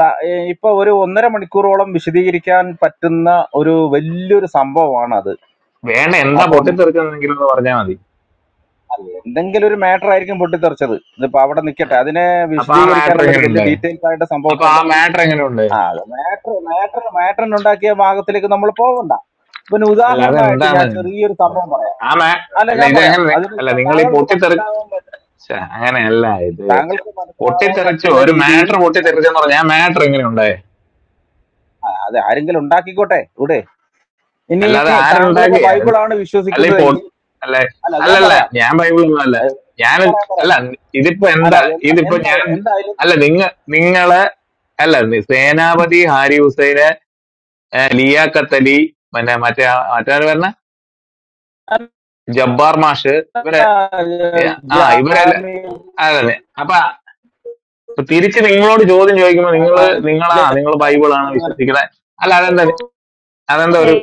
Speaker 26: ത- ഏ, ഇപ്പൊ ഒരു ഒന്നര മണിക്കൂറോളം വിശദീകരിക്കാൻ പറ്റുന്ന ഒരു വലിയൊരു സംഭവമാണ് അത്
Speaker 27: വേണ്ട എന്താ
Speaker 26: അപ്പം
Speaker 27: പൊട്ടിത്തെറിച്ചതെന്നെങ്കിലും ഒന്ന് പറഞ്ഞാൽ മതി
Speaker 26: എന്തെങ്കിലും ഒരു മാറ്റർ ആയിരിക്കും പൊട്ടിത്തെറിച്ചത് ഇതിപ്പോ അവിടെ നിൽക്കട്ടെ അതിനെ
Speaker 27: അപ്പൊ ആ മാറ്റർ
Speaker 26: വിശദീകരിക്കാനുള്ള ഒരു വലിയ
Speaker 27: എങ്ങനെയുണ്ട്
Speaker 26: ഡീറ്റെയിൽസ് ആയിട്ട്
Speaker 27: അപ്പൊ ആ
Speaker 26: സംഭവത്തിന്റെ
Speaker 27: മാറ്റർ എങ്ങനെയുണ്ട്
Speaker 26: ആ മാറ്റർ മാറ്റർ മാറ്ററിനുണ്ടാക്കിയ ഭാഗത്തിലേക്ക് നമ്മൾ പോകണ്ട പിന്നെ
Speaker 27: അല്ല
Speaker 26: ഉദാഹരണമായിട്ട് ഞാൻ
Speaker 27: അതെന്താണ്
Speaker 26: ചെറിയൊരു സംഭവം പറയാം
Speaker 27: ആ മാ
Speaker 26: അല്ല
Speaker 27: അല്ല
Speaker 26: ഞാൻ
Speaker 27: ഇത്
Speaker 26: പറയാം
Speaker 27: എങ്ങനെ
Speaker 26: അതിന്
Speaker 27: അല്ല നിങ്ങൾ ഈ
Speaker 26: താങ്കൾക്ക്
Speaker 27: പൊട്ടിത്തെറി
Speaker 26: മനസ്സിലാവും
Speaker 27: ഛെ, അങ്ങനെയല്ല ഇത്
Speaker 26: താങ്കൾക്ക് മനസ്സിലാവാൻ
Speaker 27: പൊട്ടിത്തെറിച്ച്
Speaker 26: പറ്റുന്ന
Speaker 27: ഒരു
Speaker 26: രീതിയിൽ
Speaker 27: മാറ്റർ പൊട്ടിത്തെറിച്ചെന്ന് പറഞ്ഞാൽ ആ മാറ്റർ എങ്ങനെയുണ്ട്
Speaker 26: അത് ആരെങ്കിലും ഉണ്ടാക്കിക്കോട്ടെ ഇവിടെ ഇനി
Speaker 27: അല്ലാതെ
Speaker 26: താങ്കൾ ഇപ്പൊ
Speaker 27: ആരുണ്ടാക്കി
Speaker 26: ബൈബിളാണ്
Speaker 27: അല്ല ഇപ്പൊ
Speaker 26: വിശ്വസിക്കുന്നതെങ്കിൽ
Speaker 27: അല്ല
Speaker 26: അല്ല ഞാൻ
Speaker 27: അല്ലല്ല
Speaker 26: പറയാം
Speaker 27: ഞാൻ ബൈബിളൊന്നും അല്ല
Speaker 26: ഏഹ്
Speaker 27: ഞാൻ
Speaker 26: പറയാം.
Speaker 27: അല്ല ഇതിപ്പോ
Speaker 26: അല്ല
Speaker 27: എന്താ
Speaker 26: എന്താ
Speaker 27: ഇതിപ്പോ
Speaker 26: എന്താ-
Speaker 27: ഞാൻ
Speaker 26: എന്തായാലും
Speaker 27: അല്ല നിങ്ങ നിങ്ങളെ അല്ല നി- സേനാപതി ഹാരി ഹുസൈന് ഏഹ് ലിയാഖത്ത് അലി പിന്നെ മറ്റേ ആ- മറ്റേ പറഞ്ഞ ജബ്ബാർ മാഷ്
Speaker 26: ആ,
Speaker 27: ഇവരെ ഏഹ് ആ ഇവരെല്ലാം
Speaker 26: ജാമ്യം
Speaker 27: അതെ അപ്പൊ ഇപ്പൊ തിരിച്ച് നിങ്ങളോട് ചോദ്യം ചോദിക്കുമ്പോ നിങ്ങള് നിങ്ങളാ നിങ്ങൾ ബൈബിളാണ് വിശ്വസിക്കുന്നത് അല്ല അതെന്താ
Speaker 26: ആ,
Speaker 27: അതെന്താ ഒരു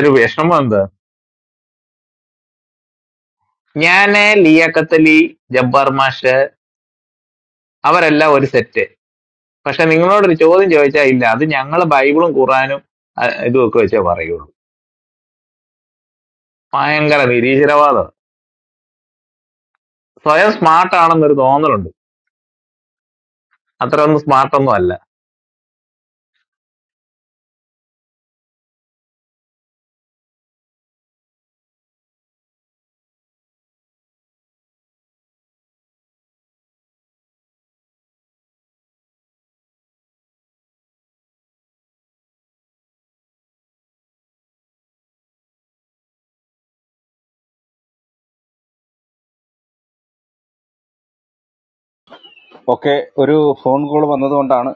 Speaker 27: ഒരു വിഷമം എന്താ ഞാന് ലിയാഖത്ത് അലി ജബ്ബാർ മാഷ് അവരെല്ലാം ഒരു സെറ്റ് പക്ഷെ നിങ്ങളോടൊരു ചോദ്യം ചോദിച്ചാൽ ഇല്ല അത് ഞങ്ങൾ ബൈബിളും ഖുറാനും അഹ് ഇതുമൊക്കെ വെച്ചേ പറയുള്ളൂ ഭയങ്കര നിരീശ്വരവാദം സ്വയം സ്മാർട്ട് ആണെന്നൊരു തോന്നലുണ്ട് അത്ര ഒന്നും സ്മാർട്ട് ഒന്നും അല്ല
Speaker 26: ഒക്കെ ഒരു ഫോൺ കോൾ വന്നതുകൊണ്ടാണ്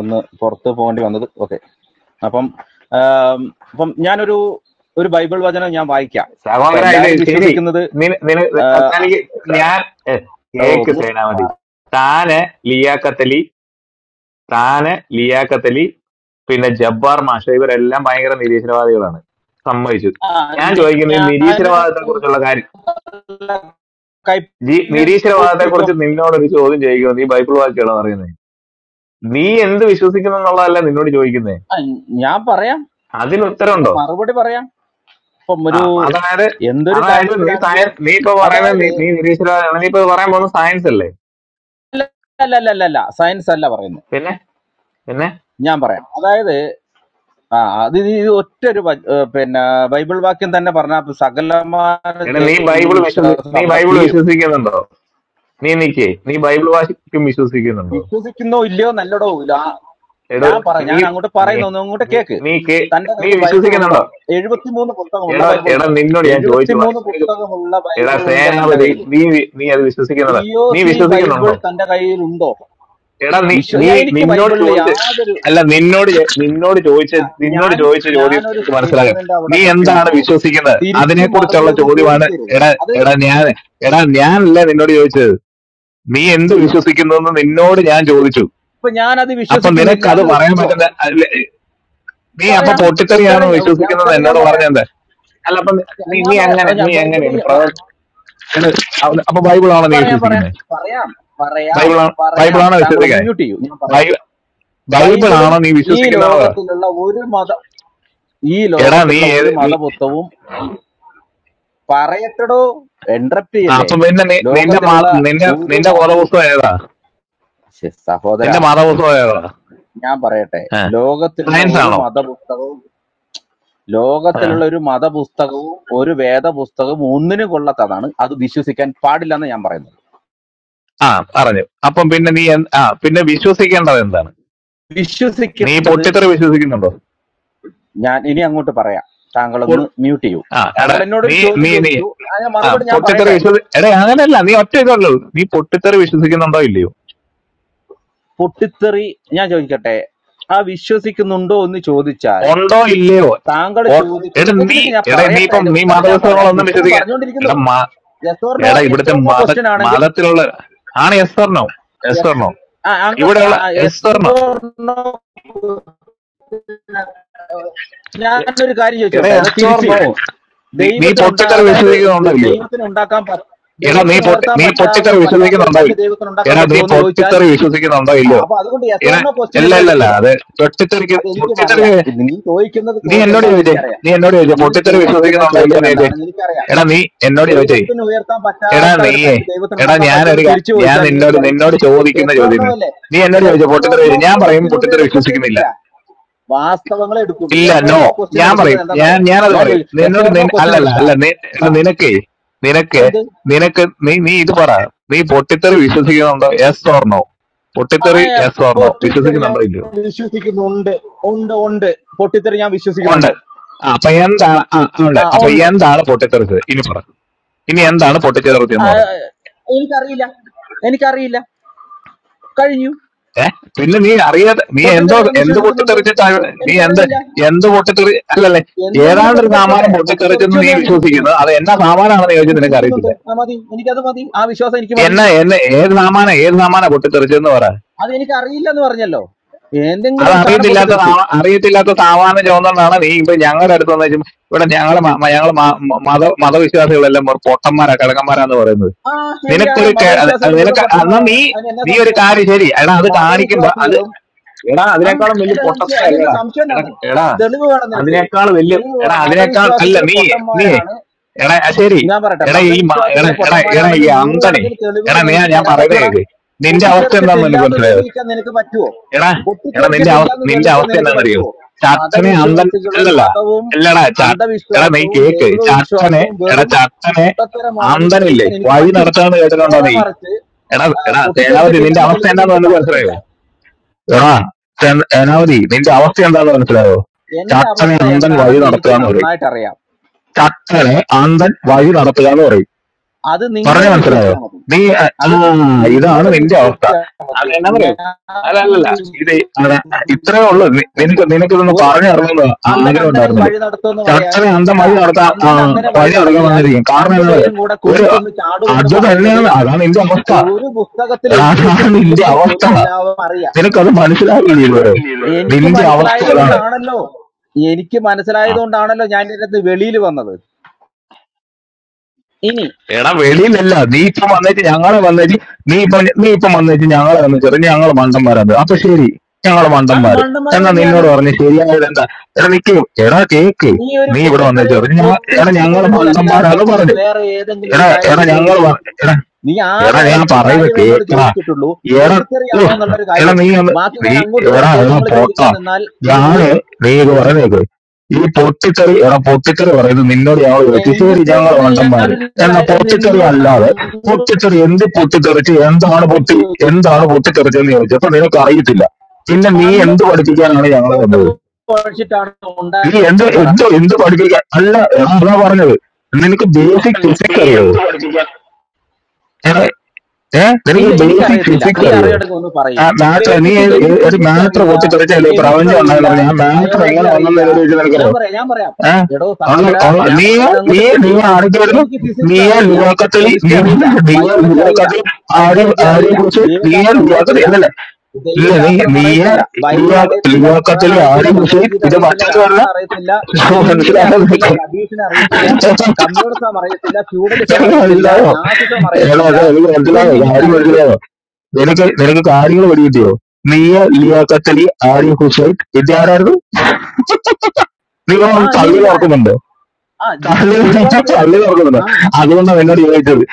Speaker 26: ഒന്ന് പുറത്ത് പോകേണ്ടി വന്നത് ഓക്കെ അപ്പം ആം, അപ്പം ഞാനൊരു ഒരു ബൈബിൾ വചനം ഞാൻ വായിക്കാം അപ്പൊ
Speaker 27: സഹോദര ഇത്
Speaker 26: എല്ലാരും
Speaker 27: ശരി
Speaker 26: വിശ്വസിക്കുന്നത്
Speaker 27: നിന- നിന-
Speaker 26: ആ,
Speaker 27: തനിക്ക് ഞാൻ ഏ,
Speaker 26: ഓ,
Speaker 27: കേക്ക്
Speaker 26: ഒന്ന്
Speaker 27: സേനാമതി താന് ലിയാക്കത്തലി താന് ലിയാക്കത്തലി പിന്നെ ജബ്ബാർ മാഷ ഇവരെല്ലാം ഭയങ്കര നിരീശ്വരവാദികളാണ് സമ്മതിച്ചു
Speaker 26: ആ,
Speaker 27: ഞാൻ ചോദിക്കുന്നത് ഈ
Speaker 26: ഞാന്
Speaker 27: നിരീശ്വരവാദത്തെ കുറിച്ചുള്ള കാര്യം ഈ
Speaker 26: കൈപ്പിന്
Speaker 27: നിരീശ്വരവാദത്തെ
Speaker 26: കൂട്ടിക്കോ
Speaker 27: കുറിച്ച് നിന്നോടൊരു ചോദ്യം ചോദിക്കുന്നത് ഈ ബൈബിൾ വാക്യമാണ് പറയുന്നത് നീ എന്ത് വിശ്വസിക്കുന്നു എന്നുള്ളതല്ല നിന്നോട് ചോദിക്കുന്നേ
Speaker 26: ആ, ഞാൻ പറയാം
Speaker 27: അതിന്
Speaker 26: എന്റെ
Speaker 27: ഉത്തരവുണ്ടോ
Speaker 26: മറുപടി പറയാം ഇപ്പം
Speaker 27: ആ
Speaker 26: ഒരു
Speaker 27: അതായത്
Speaker 26: എന്തൊരു
Speaker 27: അതായത് നീ
Speaker 26: കാര്യത്തിലാണെങ്കിലും
Speaker 27: സയൻസ് നീ ഇപ്പൊ പറയുന്നത് നീ
Speaker 26: അതായത്
Speaker 27: നീ നിരീശ്വരവാദിയാണ് നീ ഇപ്പൊ പറയാൻ പോകുന്നത് സയൻസ് അല്ലേ
Speaker 26: അല്ല അല്ല അല്ല അല്ല സയൻസ് അല്ല പറയുന്നത്
Speaker 27: പിന്നെ പിന്നെ
Speaker 26: ഞാൻ പറയാം അതായത് ആ അത് ഈ ഒറ്റ ഒരു വ- ഏ, പിന്നെ ബൈബിൾ വാക്യം തന്നെ പറഞ്ഞ സകലമായ
Speaker 27: എടാ നീ ബൈബിൾ വിശ്വസി
Speaker 26: ദൈവവിശ്വാസം
Speaker 27: നീ
Speaker 26: അവിടെ
Speaker 27: ബൈബിൾ
Speaker 26: തീരും
Speaker 27: വിശ്വസിക്കുന്നുണ്ടോ നീ നിക്കേ നീ ബൈബിൾ വാശിക്കും വിശ്വസിക്കുന്നുണ്ടോ
Speaker 26: വിശ്വസിക്കുന്നോ ഇല്ലയോ നല്ലടോ ഇല്ല ആ,
Speaker 27: എടോ
Speaker 26: ഞാൻ പറ
Speaker 27: നീ
Speaker 26: ഞാൻ അങ്ങോട്ട്
Speaker 27: നീ
Speaker 26: പറയുന്നു ഒന്ന് അങ്ങോട്ട്
Speaker 27: നീ
Speaker 26: കേക്ക്
Speaker 27: നീ കേ-
Speaker 26: തന്റെ
Speaker 27: നീ
Speaker 26: കയ്യിൽ ബൈബിൾ ഉണ്ടോ
Speaker 27: വിശ്വസിക്കുന്നുണ്ടോ
Speaker 26: എഴുപത്തിമൂന്ന് പുസ്തകമുള്ള
Speaker 27: എടോ
Speaker 26: ബൈബിൾ
Speaker 27: എടാ
Speaker 26: ഉണ്ടോ
Speaker 27: നിന്നോട് ഞാൻ ചോദിച്ചു വാ-
Speaker 26: എഴുപത്തിമൂന്ന്
Speaker 27: നിനക്ക്
Speaker 26: പുസ്തകമുള്ള
Speaker 27: എടാ
Speaker 26: ബൈബിൾ ഉണ്ടോ തന്റെ
Speaker 27: സേനാപതി
Speaker 26: കയ്യിൽ
Speaker 27: നീ വി- നീ അത്
Speaker 26: പി
Speaker 27: വിശ്വസിക്കുന്നുണ്ടോ
Speaker 26: ഒ
Speaker 27: നീ
Speaker 26: സി ബൈബിൾ
Speaker 27: വിശ്വസിക്കുന്നുണ്ടോ
Speaker 26: തന്റെ കയ്യിൽ ഉണ്ടോ
Speaker 27: എടാ നീ
Speaker 26: വിശ്വ
Speaker 27: നീ
Speaker 26: ഞാൻ എനിക്ക്
Speaker 27: നിന്നോട്
Speaker 26: ബൈബിളിൽ
Speaker 27: ചോദിച്ച
Speaker 26: യാതൊരു
Speaker 27: അല്ല നിന്നോട് ചോ- നിന്നോട് ചോദിച്ച നിന്നോട്
Speaker 26: ഞാൻ
Speaker 27: ചോദിച്ച ചോദ്യം
Speaker 26: ഞാനൊരു
Speaker 27: എനിക്ക് മനസ്സിലാകും
Speaker 26: സ്റ്റേറ്റ്മെന്റ് അവിടെ
Speaker 27: നീ എന്താണ്
Speaker 26: വെക്കുമ്പോൾ
Speaker 27: വിശ്വസിക്കുന്നത്
Speaker 26: തിരിച്ചു
Speaker 27: അതിനെ കുറിച്ചുള്ള
Speaker 26: മറുചോദ്യം
Speaker 27: ചോദ്യമാണ്
Speaker 26: ചോദിക്കരുത്
Speaker 27: എടാ
Speaker 26: അത്
Speaker 27: എടാ ഞാൻ എടാ ഞാനല്ല നിന്നോട് ചോദിച്ചത് നീ എന്ത് വിശ്വസിക്കുന്നു എന്ന് നിന്നോട് ഞാൻ ചോദിച്ചു
Speaker 26: ഇപ്പൊ ഞാൻ അത്
Speaker 27: അപ്പൊ നിനക്ക്
Speaker 26: വിശ്വസിക്കുന്നില്ല
Speaker 27: അത്
Speaker 26: എന്ന്
Speaker 27: പറയാൻ
Speaker 26: വെച്ചോ
Speaker 27: പറ്റുന്ന അല്ല, നീ അപ്പൊ
Speaker 26: പറയാം
Speaker 27: പൊട്ടിത്തെറിയാണ്
Speaker 26: ഉത്തരം ഞാൻ- ഞാൻ-
Speaker 27: വിശ്വസിക്കുന്നത്
Speaker 26: ഉത്തരം ഞാൻ
Speaker 27: എന്നോട്
Speaker 26: പറയാം
Speaker 27: പറഞ്ഞത് അല്ല അപ്പൊ
Speaker 26: ഞാൻ
Speaker 27: നീ
Speaker 26: ഞാൻ
Speaker 27: നീ
Speaker 26: പറയാം
Speaker 27: അങ്ങനെ
Speaker 26: ബ- ഞാൻ
Speaker 27: നീ
Speaker 26: ബൈബിളിൽ
Speaker 27: എങ്ങനെയാണ്
Speaker 26: ബ-
Speaker 27: പ്രവർ എടാ, അവ- അപ്പൊ ബൈബിളാണോ നീ
Speaker 26: പറയാം പറയാം
Speaker 27: വിശ്വസിക്കുന്നത്
Speaker 26: പറയാം പറയാം
Speaker 27: ബൈബിളാണ്
Speaker 26: പറയാം
Speaker 27: ബൈബിളാണോ
Speaker 26: താങ്കൾ ഒന്ന്
Speaker 27: വിശ്വസിക്കുന്നത്
Speaker 26: മ്യൂട്ട് ചെയ്യൂ ഞാൻ പറയാം
Speaker 27: ബൈബിൾ
Speaker 26: ബൈബിളും
Speaker 27: ആണോ നീ
Speaker 26: ഈ
Speaker 27: വിശ്വസിക്കുന്നതെന്ന് പറ
Speaker 26: ലോകത്തിലുള്ള ഒരു മത ഈ
Speaker 27: എടാ നീ
Speaker 26: ലോകത്തിലുള്ള ഒരു
Speaker 27: ഏത് നീ
Speaker 26: മതപുത്തവും പറയട്ടടോ എൻട്രപ്റ്റ്
Speaker 27: ആ,
Speaker 26: ചെയ്യല്ലേ
Speaker 27: അപ്പൊ പിന്നെ നീ- നിന്റെ
Speaker 26: ലോകത്തിലുള്ള
Speaker 27: മാ- നിന്റെ
Speaker 26: ഒരു
Speaker 27: നിന്റെ
Speaker 26: മതപുത്ത
Speaker 27: കോലപുസ്തകം ഏതാ
Speaker 26: സഹോദര
Speaker 27: നിന്റെ മാതാപുസ്തകം ഏതാ
Speaker 26: ഞാൻ പറയട്ടെ
Speaker 27: ഏ,
Speaker 26: ലോകത്തിലുള്ള
Speaker 27: സയൻസ്
Speaker 26: ഒരു
Speaker 27: ആണോ
Speaker 26: മത
Speaker 27: ഏ,
Speaker 26: ലോകത്തിലുള്ള ഒരു മതപുസ്തകവും ഒരു വേദപുസ്തകവും ഒന്നിനും കൊള്ളാത്തതാണ് അത് വിശ്വസിക്കാൻ പാടില്ലെന്ന് ഞാൻ പറയുന്നത്
Speaker 27: ആ പറഞ്ഞു അപ്പം പിന്നെ നീ എന്ത്- ആ പിന്നെ വിശ്വസിക്കേണ്ടത് എന്താണ് നീ
Speaker 26: വിശ്വസിക്കേണ്ടത്
Speaker 27: പൊട്ടിത്തെറി വിശ്വസിക്കുന്നുണ്ടോ
Speaker 26: ഞാൻ ഇനി അങ്ങോട്ട് പറയാം താങ്കളൊന്ന്
Speaker 27: പൊ-
Speaker 26: മ്യൂട്ട് ചെയ്യൂ
Speaker 27: ആ എടാ
Speaker 26: താങ്കൾ എന്നോടൊരു
Speaker 27: നീ
Speaker 26: ചോദ്യം
Speaker 27: നീ നീ
Speaker 26: ചോദിച്ചു അതിന്
Speaker 27: ആ
Speaker 26: മറുപടി ഞാൻ
Speaker 27: പൊട്ടിത്തെറി
Speaker 26: പറയട്ടെ
Speaker 27: വിശ്വസി എടാ അങ്ങനെയല്ല നീ ഒറ്റ ഇതല്ലോ നീ പൊട്ടിത്തെറി വിശ്വസിക്കുന്നുണ്ടോ ഇല്ലയോ
Speaker 26: പൊട്ടിത്തെറി ഞാൻ ചോദിക്കട്ടെ ആ വിശ്വസിക്കുന്നുണ്ടോ എന്ന് ചോദിച്ചാൽ
Speaker 27: ഉണ്ടോ ഇല്ലയോ
Speaker 26: താങ്കൾ
Speaker 27: ഓ-
Speaker 26: ചോദിക്കുന്ന
Speaker 27: എടാ
Speaker 26: നിക്ക്
Speaker 27: നീ
Speaker 26: നിക്ക് ഞാൻ
Speaker 27: എടാ നീ
Speaker 26: പറയട്ടെ
Speaker 27: ഇപ്പം
Speaker 26: അതിന്റെ
Speaker 27: നീ
Speaker 26: ഉത്തരം ഞാൻ പറയാം
Speaker 27: മാതാപുസ്തകങ്ങളൊന്നും
Speaker 26: ഉത്തരം
Speaker 27: വിശ്വസിക്കാൻ
Speaker 26: പറഞ്ഞുകൊണ്ടിരിക്കുന്നു
Speaker 27: എടാ
Speaker 26: യെസ് ഓർ നോ
Speaker 27: എടാ
Speaker 26: യെസ്
Speaker 27: ഇവിടുത്തെ
Speaker 26: ഓർ നോ
Speaker 27: മത
Speaker 26: ക്വസ്റ്റ്യൻ ആണെങ്കിൽ
Speaker 27: മതത്തിലുള്ള ആണ് എസ് പറഞ്ഞോ എസ്
Speaker 26: yes-
Speaker 27: പറഞ്ഞോ
Speaker 26: ആ, അങ്ങ- ആ,
Speaker 27: ഇവിടെയുള്ള
Speaker 26: ആ, yes
Speaker 27: എസ് പറഞ്ഞോ
Speaker 26: or no ഞാനൊരു കാര്യം
Speaker 27: എടാ
Speaker 26: ചോദിച്ചോട്ടെ എന്നാ
Speaker 27: എസ്
Speaker 26: തിരിച്ച്
Speaker 27: പറഞ്ഞോ നീ നീ
Speaker 26: ദൈവത്തിനുണ്ടാ
Speaker 27: പൊട്ടിത്തെറി
Speaker 26: അതായത്
Speaker 27: വിശ്വസിക്കുന്നുണ്ടോ ഇല്ലയോ
Speaker 26: ദൈവത്തിന് ഉണ്ടാക്കാൻ പ-
Speaker 27: എടാ നീ
Speaker 26: ദൈവത്തിന്
Speaker 27: പൊട്ടി
Speaker 26: ഉയർത്താൻ
Speaker 27: നീ
Speaker 26: പറ്റാവ
Speaker 27: പൊട്ടിത്തെറി
Speaker 26: പറ്റാത്തൊരു
Speaker 27: വിശ്വസിക്കുന്നുണ്ടോ
Speaker 26: കല്ല്
Speaker 27: ഇല്ല-
Speaker 26: ദൈവത്തിന് ഉണ്ടാക്കാൻ
Speaker 27: എടാ നീ
Speaker 26: പറ്റുമോ എന്ന് ചോദിച്ചാൽ
Speaker 27: പൊട്ടിത്തെറി വിശ്വസിക്കുന്നുണ്ടോ
Speaker 26: ആ,
Speaker 27: ഇല്ലയോ
Speaker 26: അപ്പൊ അതുകൊണ്ട്
Speaker 27: എടാ
Speaker 26: യസോർണോ ക്വസ്റ്റ്യൻ
Speaker 27: അല്ല
Speaker 26: ഇവിടെ
Speaker 27: അല്ല അല്ല
Speaker 26: എടുക്കൂല
Speaker 27: അത് പൊട്ടിത്തെറിക്ക്
Speaker 26: അത് എനിക്കും
Speaker 27: പൊട്ടിത്തെറി
Speaker 26: അറിയാം ഇത് നീ ചോദിക്കുന്നത്
Speaker 27: നീ
Speaker 26: ചോദ്യം
Speaker 27: എന്നോട്
Speaker 26: എന്താണെന്ന്
Speaker 27: ചോദിച്ചേ
Speaker 26: എനിക്കറിയാം
Speaker 27: നീ എന്നോട് ചോദിച്ചേ
Speaker 26: നീ
Speaker 27: പൊട്ടിത്തെറി
Speaker 26: ചോദിക്കുന്ന
Speaker 27: വിശ്വസിക്കുന്നുണ്ടോ ഇല്ലയോ
Speaker 26: ചോദ്യം
Speaker 27: എന്ന് ചോദിച്ചേ
Speaker 26: എന്താണെന്ന് എനിക്കറിയാം
Speaker 27: എടാ നീ എന്നോട് ചോദിച്ചേ
Speaker 26: ദൈവത്തിന് ഉയർത്താൻ
Speaker 27: എടാ
Speaker 26: പറ്റാത്ത ഒരു
Speaker 27: നീയേ
Speaker 26: കല്ല് ദൈവത്തിന്
Speaker 27: എടാ
Speaker 26: ഉണ്ടാക്കാൻ പറ്റുമോ
Speaker 27: ഞാനൊരു
Speaker 26: എന്ന്
Speaker 27: കാ-
Speaker 26: തിരിച്ചു
Speaker 27: ഞാൻ
Speaker 26: ചോദിച്ചാൽ നീ എന്ത്
Speaker 27: നിന്നോട്
Speaker 26: പറയും
Speaker 27: നിന്നോട് ചോദിക്കുന്ന
Speaker 26: യസോർണോ
Speaker 27: ചോദ്യങ്ങൾ
Speaker 26: അല്ലേ
Speaker 27: നീ എന്നോട് ചോദിച്ചു പൊട്ടിത്തെറി
Speaker 26: യസോർണോ
Speaker 27: വിശ്വ- ഞാൻ പറയും
Speaker 26: ക്വസ്റ്റ്യൻ ഇവിടെ
Speaker 27: പൊട്ടിത്തെറി വിശ്വസിക്കുന്നില്ല
Speaker 26: എടുക്കത്തില്ല വാസ്തവങ്ങൾ എടുക്കുള്ളൂ
Speaker 27: ഇല്ല
Speaker 26: എസ്
Speaker 27: നോ
Speaker 26: ഓർണോ ക്വസ്റ്റ്യൻ
Speaker 27: ഞാൻ
Speaker 26: എടുക്കുന്നത്
Speaker 27: പറയും ഞാൻ
Speaker 26: എന്താണെന്നറിയോ
Speaker 27: ഞാനത്
Speaker 26: ഞാൻ
Speaker 27: പറയും
Speaker 26: ചോദിക്കും എസ്
Speaker 27: നിന്നോട്
Speaker 26: ഓർണോ
Speaker 27: നിൻ-
Speaker 26: ക്വസ്റ്റ്യൻ
Speaker 27: അല്ലല്ല അല്ല
Speaker 26: എടുത്താൽ
Speaker 27: നി-
Speaker 26: ആ
Speaker 27: എടാ, നിനക്കേ നിനക്ക്
Speaker 26: എന്ത്
Speaker 27: നിനക്ക് നീ നീ ഇത് പറ നീ പൊട്ടിത്തെറി വിശ്വസിക്കുന്നുണ്ടോ യെസ് ഓർണോ
Speaker 26: ആ,
Speaker 27: പൊട്ടിത്തെറി
Speaker 26: ഏ,
Speaker 27: യെസ് ഓർണോ
Speaker 26: പൊട്ടിത്തെറി ഞാൻ
Speaker 27: വിശ്വസിക്കുന്നുണ്ടോ ഇല്ലയോ
Speaker 26: വിശ്വസിക്കുന്നുണ്ട് ഉണ്ട് ഉണ്ട് പൊട്ടിത്തെറി ഞാൻ
Speaker 27: ഉണ്ട്
Speaker 26: വിശ്വസിക്കുന്നുണ്ട്
Speaker 27: ആ, അപ്പൊ എന്താണ് ആ, ഉണ്ട്
Speaker 26: ആ
Speaker 27: അപ്പൊ
Speaker 26: ഉണ്ട്
Speaker 27: എന്താണ് പൊട്ടിത്തെറിച്ചത് ഇനി പറ ഇനി എന്താണ് പൊട്ടിച്ചെറുത്തി
Speaker 26: ആ,
Speaker 27: എന്ന് പറ
Speaker 26: എനിക്കറിയില്ല എനിക്കറിയില്ല കഴിഞ്ഞു
Speaker 27: ഏ പിന്നെ നീ അറിയാതെ നീ എന്തോ
Speaker 26: പൊട്ടിത്തെറി ഞാൻ
Speaker 27: എന്ത്
Speaker 26: വിശ്വസിക്കുന്നുണ്ട്
Speaker 27: പൊട്ടിത്തെറിച്ചിട്ടാ നീ എന്ത്
Speaker 26: എനിക്കറിയില്ല
Speaker 27: എന്ത് പൊട്ടിത്തെറി അല്ലല്ലേ
Speaker 26: എന്തെങ്കിലും
Speaker 27: ഏതാണ്ട് ഒരു
Speaker 26: പൊട്ടിത്തെറിച്ചോട്ടെ
Speaker 27: സാമാനം
Speaker 26: പൊട്ടിത്തെറിച്ചു
Speaker 27: പൊട്ടിത്തെറിച്ചെന്ന് നീ
Speaker 26: എന്ന് ഞാൻ വിശ്വസിക്കുന്നു
Speaker 27: വിശ്വസിക്കുന്നു അത് എന്നാ സാമാനാണെന്ന് ചോദിച്ചാൽ നിനക്ക്
Speaker 26: വിശ്വസിക്കുന്നുണ്ട്
Speaker 27: അറിയത്തില്ല
Speaker 26: ആ മതി എനിക്കത് മതി ആ വിശ്വാസം എനിക്ക് മതി
Speaker 27: എന്നാ എന്നെ ഏത് സാമാനം ഏത് സാമാനം പൊട്ടിത്തെറിച്ചെന്ന് പറ
Speaker 26: അത് എനിക്ക് അറിയില്ല എന്ന് പറഞ്ഞല്ലോ എന്തെങ്കിലും
Speaker 27: അത്
Speaker 26: ഒരു സാധനം
Speaker 27: അറിയത്തില്ലാത്ത
Speaker 26: പൊട്ടിത്തെറിച്ചു
Speaker 27: സാ- അറിയത്തില്ലാത്ത സാമാനം ചോദിച്ചോണ്ടാണ് നീ ഇപ്പൊ ഞങ്ങളുടെ അടുത്ത് വന്നു ഇവിടെ ഞങ്ങള് മ- മ- ഞങ്ങള് മ- മ- മത മതവിശ്വാസികളെല്ലാം വെറും പൊട്ടന്മാരാ കിടക്കന്മാരാന്ന് പറയുന്നത്
Speaker 26: ആ ശരിയാണ്
Speaker 27: നിനക്കൊരു കേ- അത് അത്
Speaker 26: മതവിശ്വാസികൾ മുഴുവൻ
Speaker 27: നിനക്ക് എന്നാ
Speaker 26: പൊട്ടന്മാരാണ്
Speaker 27: നീ
Speaker 26: അതിന് എന്നാ
Speaker 27: നീ ഒരു
Speaker 26: സംശയം
Speaker 27: കാര്യം ശരി എടാ അത് കാണിക്കുമ്പോ അത്
Speaker 26: മതവിശ്വാസികളും
Speaker 27: എടാ
Speaker 26: ആ
Speaker 27: അതിനേക്കാളും വലിയ
Speaker 26: എന്നെ സംശയം അതിന് എന്നാ
Speaker 27: പൊട്ടത്തല്ലടാ
Speaker 26: സംശയം
Speaker 27: എടാ
Speaker 26: എന്നാണ്
Speaker 27: എടാ
Speaker 26: തെളിവ് വേണം നിനക്ക്
Speaker 27: അതിനേക്കാൾ വലിയ
Speaker 26: തെളിവ്
Speaker 27: എടാ
Speaker 26: വേണം
Speaker 27: അതിനേക്കാൾ അല്ല
Speaker 26: മതവിശ്വാസികൾ
Speaker 27: നീ നീ
Speaker 26: പൊട്ടന്മാരാണ്
Speaker 27: എടാ ആ ശരി
Speaker 26: ഞാൻ പറയട്ടെ
Speaker 27: എടാ ഈ മ-
Speaker 26: മതവിശ്വാസികൾ
Speaker 27: എടാ എടാ എടാ
Speaker 26: പൊട്ടന്മാരാണെന്ന്
Speaker 27: ഈ അന്തനെ
Speaker 26: നൂറുകണക്കിന് തെളിവുകൾ
Speaker 27: എടാ നീ
Speaker 26: എനിക്ക്
Speaker 27: ഞാൻ
Speaker 26: തരാൻ
Speaker 27: പറയുന്നത്
Speaker 26: പറ്റൂടാ
Speaker 27: കേക്ക് നിന്റെ അവസ്ഥ എന്താന്ന്
Speaker 26: പൊട്ടിത്തെറിച്ചിട്ടില്ല
Speaker 27: എനിക്ക്
Speaker 26: എന്ന്
Speaker 27: മനസ്സിലായത്
Speaker 26: തെളിയിക്കാൻ നിനക്ക് പറ്റുമോ
Speaker 27: എടാ എടാ നിന്റെ
Speaker 26: പൊട്ടിത്തെറിച്ചിട്ടില്ല
Speaker 27: അവസ്ഥ
Speaker 26: എന്ന്
Speaker 27: നിന്റെ
Speaker 26: തെളിയിക്കാൻ
Speaker 27: അവസ്ഥ
Speaker 26: നിനക്ക്
Speaker 27: എന്താണെന്നറിയോ
Speaker 26: പറ്റുമോ
Speaker 27: ചട്ടനെ അന്തൻ
Speaker 26: മതവിശ്വാസികളും
Speaker 27: അല്ലല്ല
Speaker 26: മതവും
Speaker 27: അല്ലടാ ചാ എടാ നീ
Speaker 26: അന്ധവിശ്വാസവും
Speaker 27: കേക്ക് ചട്ടനെ
Speaker 26: ദൈവവിശ്വാസവും
Speaker 27: എടാ
Speaker 26: വെറും
Speaker 27: ചട്ടനെ
Speaker 26: പൊട്ടത്തരമാണെന്ന്
Speaker 27: അന്തനില്ലേ
Speaker 26: തെളിയിക്കാൻ എനിക്ക്
Speaker 27: വഴി
Speaker 26: പറ്റും
Speaker 27: നടത്താന്ന് കേട്ടിട്ടുണ്ടോ
Speaker 26: നേരെ
Speaker 27: നീ
Speaker 26: മറിച്ച്
Speaker 27: എടാ
Speaker 26: ആ,
Speaker 27: എടാ സേനാപതി
Speaker 26: പൊട്ടിത്തെറിച്ചിട്ടില്ല
Speaker 27: നിന്റെ
Speaker 26: എന്ന്
Speaker 27: അവസ്ഥ
Speaker 26: തെളിയിക്കാൻ
Speaker 27: എന്താന്ന്
Speaker 26: എനിക്ക്
Speaker 27: എനിക്ക്
Speaker 26: പറ്റത്തില്ല
Speaker 27: മനസ്സിലായോ എടാ സേനാപതി നിന്റെ അവസ്ഥ എന്താന്ന് മനസ്സിലായോ
Speaker 26: എന്റെ
Speaker 27: ചട്ടനെ
Speaker 26: അവസ്ഥ
Speaker 27: അന്തൻ വഴി
Speaker 26: എന്താണെന്ന് എനിക്ക്
Speaker 27: നടത്തുക എന്ന് പറയും.
Speaker 26: നന്നായിട്ട് അറിയാം
Speaker 27: ചട്ടന് അന്തൻ വഴി നടത്തുകയെന്ന് പറയും
Speaker 26: അത് നിങ്ങൾ
Speaker 27: പറഞ്ഞു മനസ്സിലായോ
Speaker 26: വിശ്വസിക്കാൻ മതി
Speaker 27: നീ അ- ആ
Speaker 26: അത് നിങ്ങൾ
Speaker 27: ഇതാണ് നിന്റെ അവസ്ഥ
Speaker 26: വിശ്വസിച്ചാൽ
Speaker 27: അത്
Speaker 26: മതി
Speaker 27: എന്നാ പറയൂ
Speaker 26: ഞാൻ
Speaker 27: അല്ലല്ല ഇത് അത് ഇത്രേ ഉള്ളൂ നി-
Speaker 26: വിശ്വസിക്കത്തില്ല
Speaker 27: നിനക്ക് നിനക്കിതൊന്ന്
Speaker 26: ഒരു
Speaker 27: പറഞ്ഞു തരണമെന്ന്
Speaker 26: അന്തൻ
Speaker 27: ആഗ്രഹം
Speaker 26: അന്തനെ
Speaker 27: ഉണ്ടായിരുന്നുള്ളൂ
Speaker 26: വഴി നടത്തുമെന്ന് പറയാൻ
Speaker 27: ചട്ടന് അന്തം
Speaker 26: എടാ,
Speaker 27: വഴി നടത്താൻ ആ,
Speaker 26: അന്തൻ അന്തനെ വഴി
Speaker 27: വഴി നടക്കാൻ
Speaker 26: നടത്തിയാൽ
Speaker 27: വന്നിരിക്കും കാരണം എന്നാ പറയും
Speaker 26: രണ്ടുപേരും കൂടെ കുഴി
Speaker 27: ഒരു
Speaker 26: ചെന്ന് ചാടും എന്ന്
Speaker 27: അത്
Speaker 26: പറയുന്നത്
Speaker 27: തന്നെയാണ് അതാണ് നിന്റെ അവസ്ഥ
Speaker 26: ഒരു പുസ്തകത്തിൽ
Speaker 27: എടാ,
Speaker 26: എഴുതി
Speaker 27: അതാണ് നിന്റെ
Speaker 26: വെച്ചിട്ടില്ലെങ്കിൽ
Speaker 27: അവസ്ഥ
Speaker 26: പോലും എല്ലാവരും അറിയാം
Speaker 27: നിനക്കത് മനസ്സിലാവില്ല ഇതുവരെ
Speaker 26: എനിക്ക്
Speaker 27: നിന്റെ അവസ്ഥ
Speaker 26: മനസ്സിലായത്
Speaker 27: അതാണ്
Speaker 26: കൊണ്ടാണല്ലോ എനിക്ക് മനസ്സിലായത് കൊണ്ടാണല്ലോ ഞാൻ ഇതിനകത്ത് വെളിയിൽ വന്നത് ഇനി
Speaker 27: എടാ വെളിയിലല്ല നീ ഇപ്പൊ വന്നിട്ട് ഞങ്ങളെ വന്നിട്ട് നീ ഇപ്പൊ നീ ഇപ്പൊ വന്നിട്ട് ഞങ്ങളെ വന്ന് ചെറിയ ഞങ്ങള് മണ്ടന്മാരത് അപ്പൊ ശരി ഞങ്ങള്
Speaker 26: ആ
Speaker 27: മണ്ടന്മാര്
Speaker 26: മണ്ടന്മാര്
Speaker 27: എന്നാ
Speaker 26: തന്നെയാണ്
Speaker 27: നിന്നോട് പറഞ്ഞു ശരിയായത് എന്താ എടാ നിക്ക് എടാ കേക്ക്
Speaker 26: നീ ഒരു
Speaker 27: നീ ഇവിടെ വന്ന്
Speaker 26: പൊട്ടിത്തെറി
Speaker 27: ചെറിയ എടാ ഞങ്ങള്
Speaker 26: പൊട്ടിത്തെറി അല്ലാത്ത
Speaker 27: മണ്ടന്മാരാന്ന് പറഞ്ഞു
Speaker 26: വേറെ ഏതെങ്കിലും ഒരു
Speaker 27: എടാ
Speaker 26: കാര്യം
Speaker 27: എടാ
Speaker 26: നീ
Speaker 27: ഞങ്ങള്
Speaker 26: ചോദിക്കും
Speaker 27: പറ- എടാ
Speaker 26: നീ ആകെ
Speaker 27: എടാ ഞാൻ
Speaker 26: ഒരൊറ്റ
Speaker 27: പറയുന്നത്
Speaker 26: കാര്യമേ എന്നോട്
Speaker 27: കേക്കടാ
Speaker 26: ചോദിച്ചിട്ടുള്ളൂ
Speaker 27: എടാ ഓ
Speaker 26: പൊട്ടിത്തെറിയാണോ എന്നുള്ള ഒരു
Speaker 27: എടാ
Speaker 26: കാര്യം
Speaker 27: നീ ഒന്ന്
Speaker 26: ബാക്കി ഞാൻ
Speaker 27: നീ
Speaker 26: അങ്ങോട്ട് കുറെ
Speaker 27: എടാ എടാ
Speaker 26: ചോദ്യങ്ങൾ
Speaker 27: പോട്ടാ
Speaker 26: ചോദിക്കാൻ നിന്നാൽ നീ
Speaker 27: ഞാന്
Speaker 26: ഓടും
Speaker 27: നീ ഇത് പറയുന്നേക്ക് ഈ പൊട്ടിക്കറി എടാ പൊട്ടിക്കറി പറയുന്നത് നിന്നോട് ഞങ്ങൾ ചോദിച്ചു
Speaker 26: എങ്കിൽ
Speaker 27: ശരി ഞങ്ങൾ
Speaker 26: പിന്നെ
Speaker 27: വണ്ടന്മാര്
Speaker 26: ഞാനൊരു
Speaker 27: എന്നാ
Speaker 26: കാര്യം
Speaker 27: പൊട്ടിക്കറി
Speaker 26: നിന്നോട്
Speaker 27: അല്ലാതെ
Speaker 26: അങ്ങോട്ട്
Speaker 27: പൊട്ടിത്തെറി എന്ത് പൊട്ടിത്തെറിച്ച് എന്താണ് പൊട്ടി എന്താണ്
Speaker 26: ചോദിക്കാം
Speaker 27: പൊട്ടിത്തെറിച്ചെന്ന് ചോദിച്ചപ്പോ നിനക്ക് അറിയത്തില്ല പിന്നെ നീ
Speaker 26: മണ്ണ്
Speaker 27: എന്ത് പഠിപ്പിക്കാനാണ് ഞങ്ങളെ വന്നത്
Speaker 26: കുഴച്ചിട്ടാണോ
Speaker 27: നീ എന്ത്
Speaker 26: ഉണ്ടാക്കി പറ
Speaker 27: എന്ത് എന്ത് പഠിപ്പിക്കാൻ അല്ല എടാ അതാ പറഞ്ഞത് നിനക്ക് ബേസിക് ഫിസിക്സ് അറിയോ എടാ ഏ
Speaker 26: ഇല്ല
Speaker 27: നിനക്ക് ബേസിക്
Speaker 26: എനിക്കറിയത്തില്ല നീ
Speaker 27: ഫിസിക്സ് അറിയോ
Speaker 26: അറിയണമെങ്കിൽ ഒന്ന്
Speaker 27: ആ
Speaker 26: പറയും
Speaker 27: മാറ്റർ നീ
Speaker 26: ബേസിക്
Speaker 27: ഏത്
Speaker 26: എനിക്ക്
Speaker 27: ഏ- ഒരു
Speaker 26: ഫിസിക്സ്
Speaker 27: മാറ്റർ
Speaker 26: അറിയില്ല
Speaker 27: പൊട്ടിത്തെറിച്ചല്ലേ ഈ
Speaker 26: കെമിസ്ട്രി
Speaker 27: പ്രപഞ്ചം
Speaker 26: അറിയില്ല
Speaker 27: ഉണ്ടായെന്ന് പറഞ്ഞു ആ മാറ്റർ
Speaker 26: ബയോളജി
Speaker 27: എങ്ങനെ
Speaker 26: അറിയില്ല
Speaker 27: വന്നെന്ന് എന്നോട് ചോദിച്ചു
Speaker 26: ഞാൻ
Speaker 27: നിനക്കറിയോ
Speaker 26: പറയാം ഞാൻ പറയാം
Speaker 27: ഏഹ്
Speaker 26: എടോ
Speaker 27: ഉള്ള
Speaker 26: സഹോദര
Speaker 27: ഉള്ള
Speaker 26: ഞാൻ
Speaker 27: നീ
Speaker 26: പറയുന്നത്
Speaker 27: നീ
Speaker 26: അങ്ങോട്ട്
Speaker 27: നീ
Speaker 26: കേക്ക്
Speaker 27: ആരൊക്കെ വരുന്നു
Speaker 26: എനിക്ക് ഫിസിക്സ്
Speaker 27: നീയ
Speaker 26: അറിയില്ല
Speaker 27: ലുവാക്കത്തലി
Speaker 26: കെമിസ്ട്രി
Speaker 27: നീ
Speaker 26: അറിയില്ല
Speaker 27: നീയ
Speaker 26: ബയോളജി അറിയില്ല
Speaker 27: ലുവാക്കത്തലി ആരെ
Speaker 26: സൈക്കോളജി
Speaker 27: ആരെ
Speaker 26: അറിയില്ല
Speaker 27: കുറിച്ച് നീയ
Speaker 26: ജീവശാസ്ത്രം
Speaker 27: ലുവാക്കത്തലി
Speaker 26: അറിയത്തില്ല
Speaker 27: എന്നല്ല ഇല്ല നീ
Speaker 26: ദൈവശാസ്ത്രം
Speaker 27: നീയ
Speaker 26: അറിയത്തില്ല ബൈബിൾ
Speaker 27: ലുവാ
Speaker 26: അറിയത്തില്ല ഖുറാൻ
Speaker 27: ലുവാക്കത്തലി
Speaker 26: അറിയത്തില്ല
Speaker 27: ആരെ കുറിച്ച്
Speaker 26: ഭഗവത്ഗീത
Speaker 27: ഇത്
Speaker 26: അറിയത്തില്ല
Speaker 27: മറ്റേന്ന്
Speaker 26: രാമായണം
Speaker 27: പറഞ്ഞാൽ
Speaker 26: അറിയത്തില്ല ഡിങ്കിനെ
Speaker 27: മനസ്സിലായോ
Speaker 26: അറിയത്തില്ല
Speaker 27: നിനക്ക്
Speaker 26: കബീഷിനെ അറിയത്തില്ല കമ്മ്യൂണിസം അറിയത്തില്ല ഫ്യൂഡലിസം
Speaker 27: നിനക്ക്
Speaker 26: അറിയത്തില്ല
Speaker 27: മനസ്സിലായോ
Speaker 26: നാസിസം
Speaker 27: ഏടാ
Speaker 26: അറിയത്തില്ല
Speaker 27: അതെ എനിക്ക് മനസ്സിലായോ
Speaker 26: ഇതൊന്നും എനിക്ക്
Speaker 27: കാര്യം
Speaker 26: അറിയത്തില്ല
Speaker 27: മനസ്സിലായോ നിനക്ക് നിനക്ക് കാര്യങ്ങൾ പഠിക്കോ നീയ ലിയാക്കത്തലി ആര്യ ഹുസൈൻ ഇതാരായിരുന്നു നീ
Speaker 26: ആ
Speaker 27: പറഞ്ഞു തള്ളി
Speaker 26: ഇനിയും പറയാം
Speaker 27: ഓർക്കുന്നുണ്ടോ
Speaker 26: ആ ജ-
Speaker 27: തള്ളി
Speaker 26: ഒരുപാട്
Speaker 27: തള്ളി
Speaker 26: പേരുണ്ട്
Speaker 27: ഓർക്കുന്നുണ്ടോ
Speaker 26: ആ
Speaker 27: അതുകൊണ്ടാണ് എന്നോട് ചോദിച്ചത്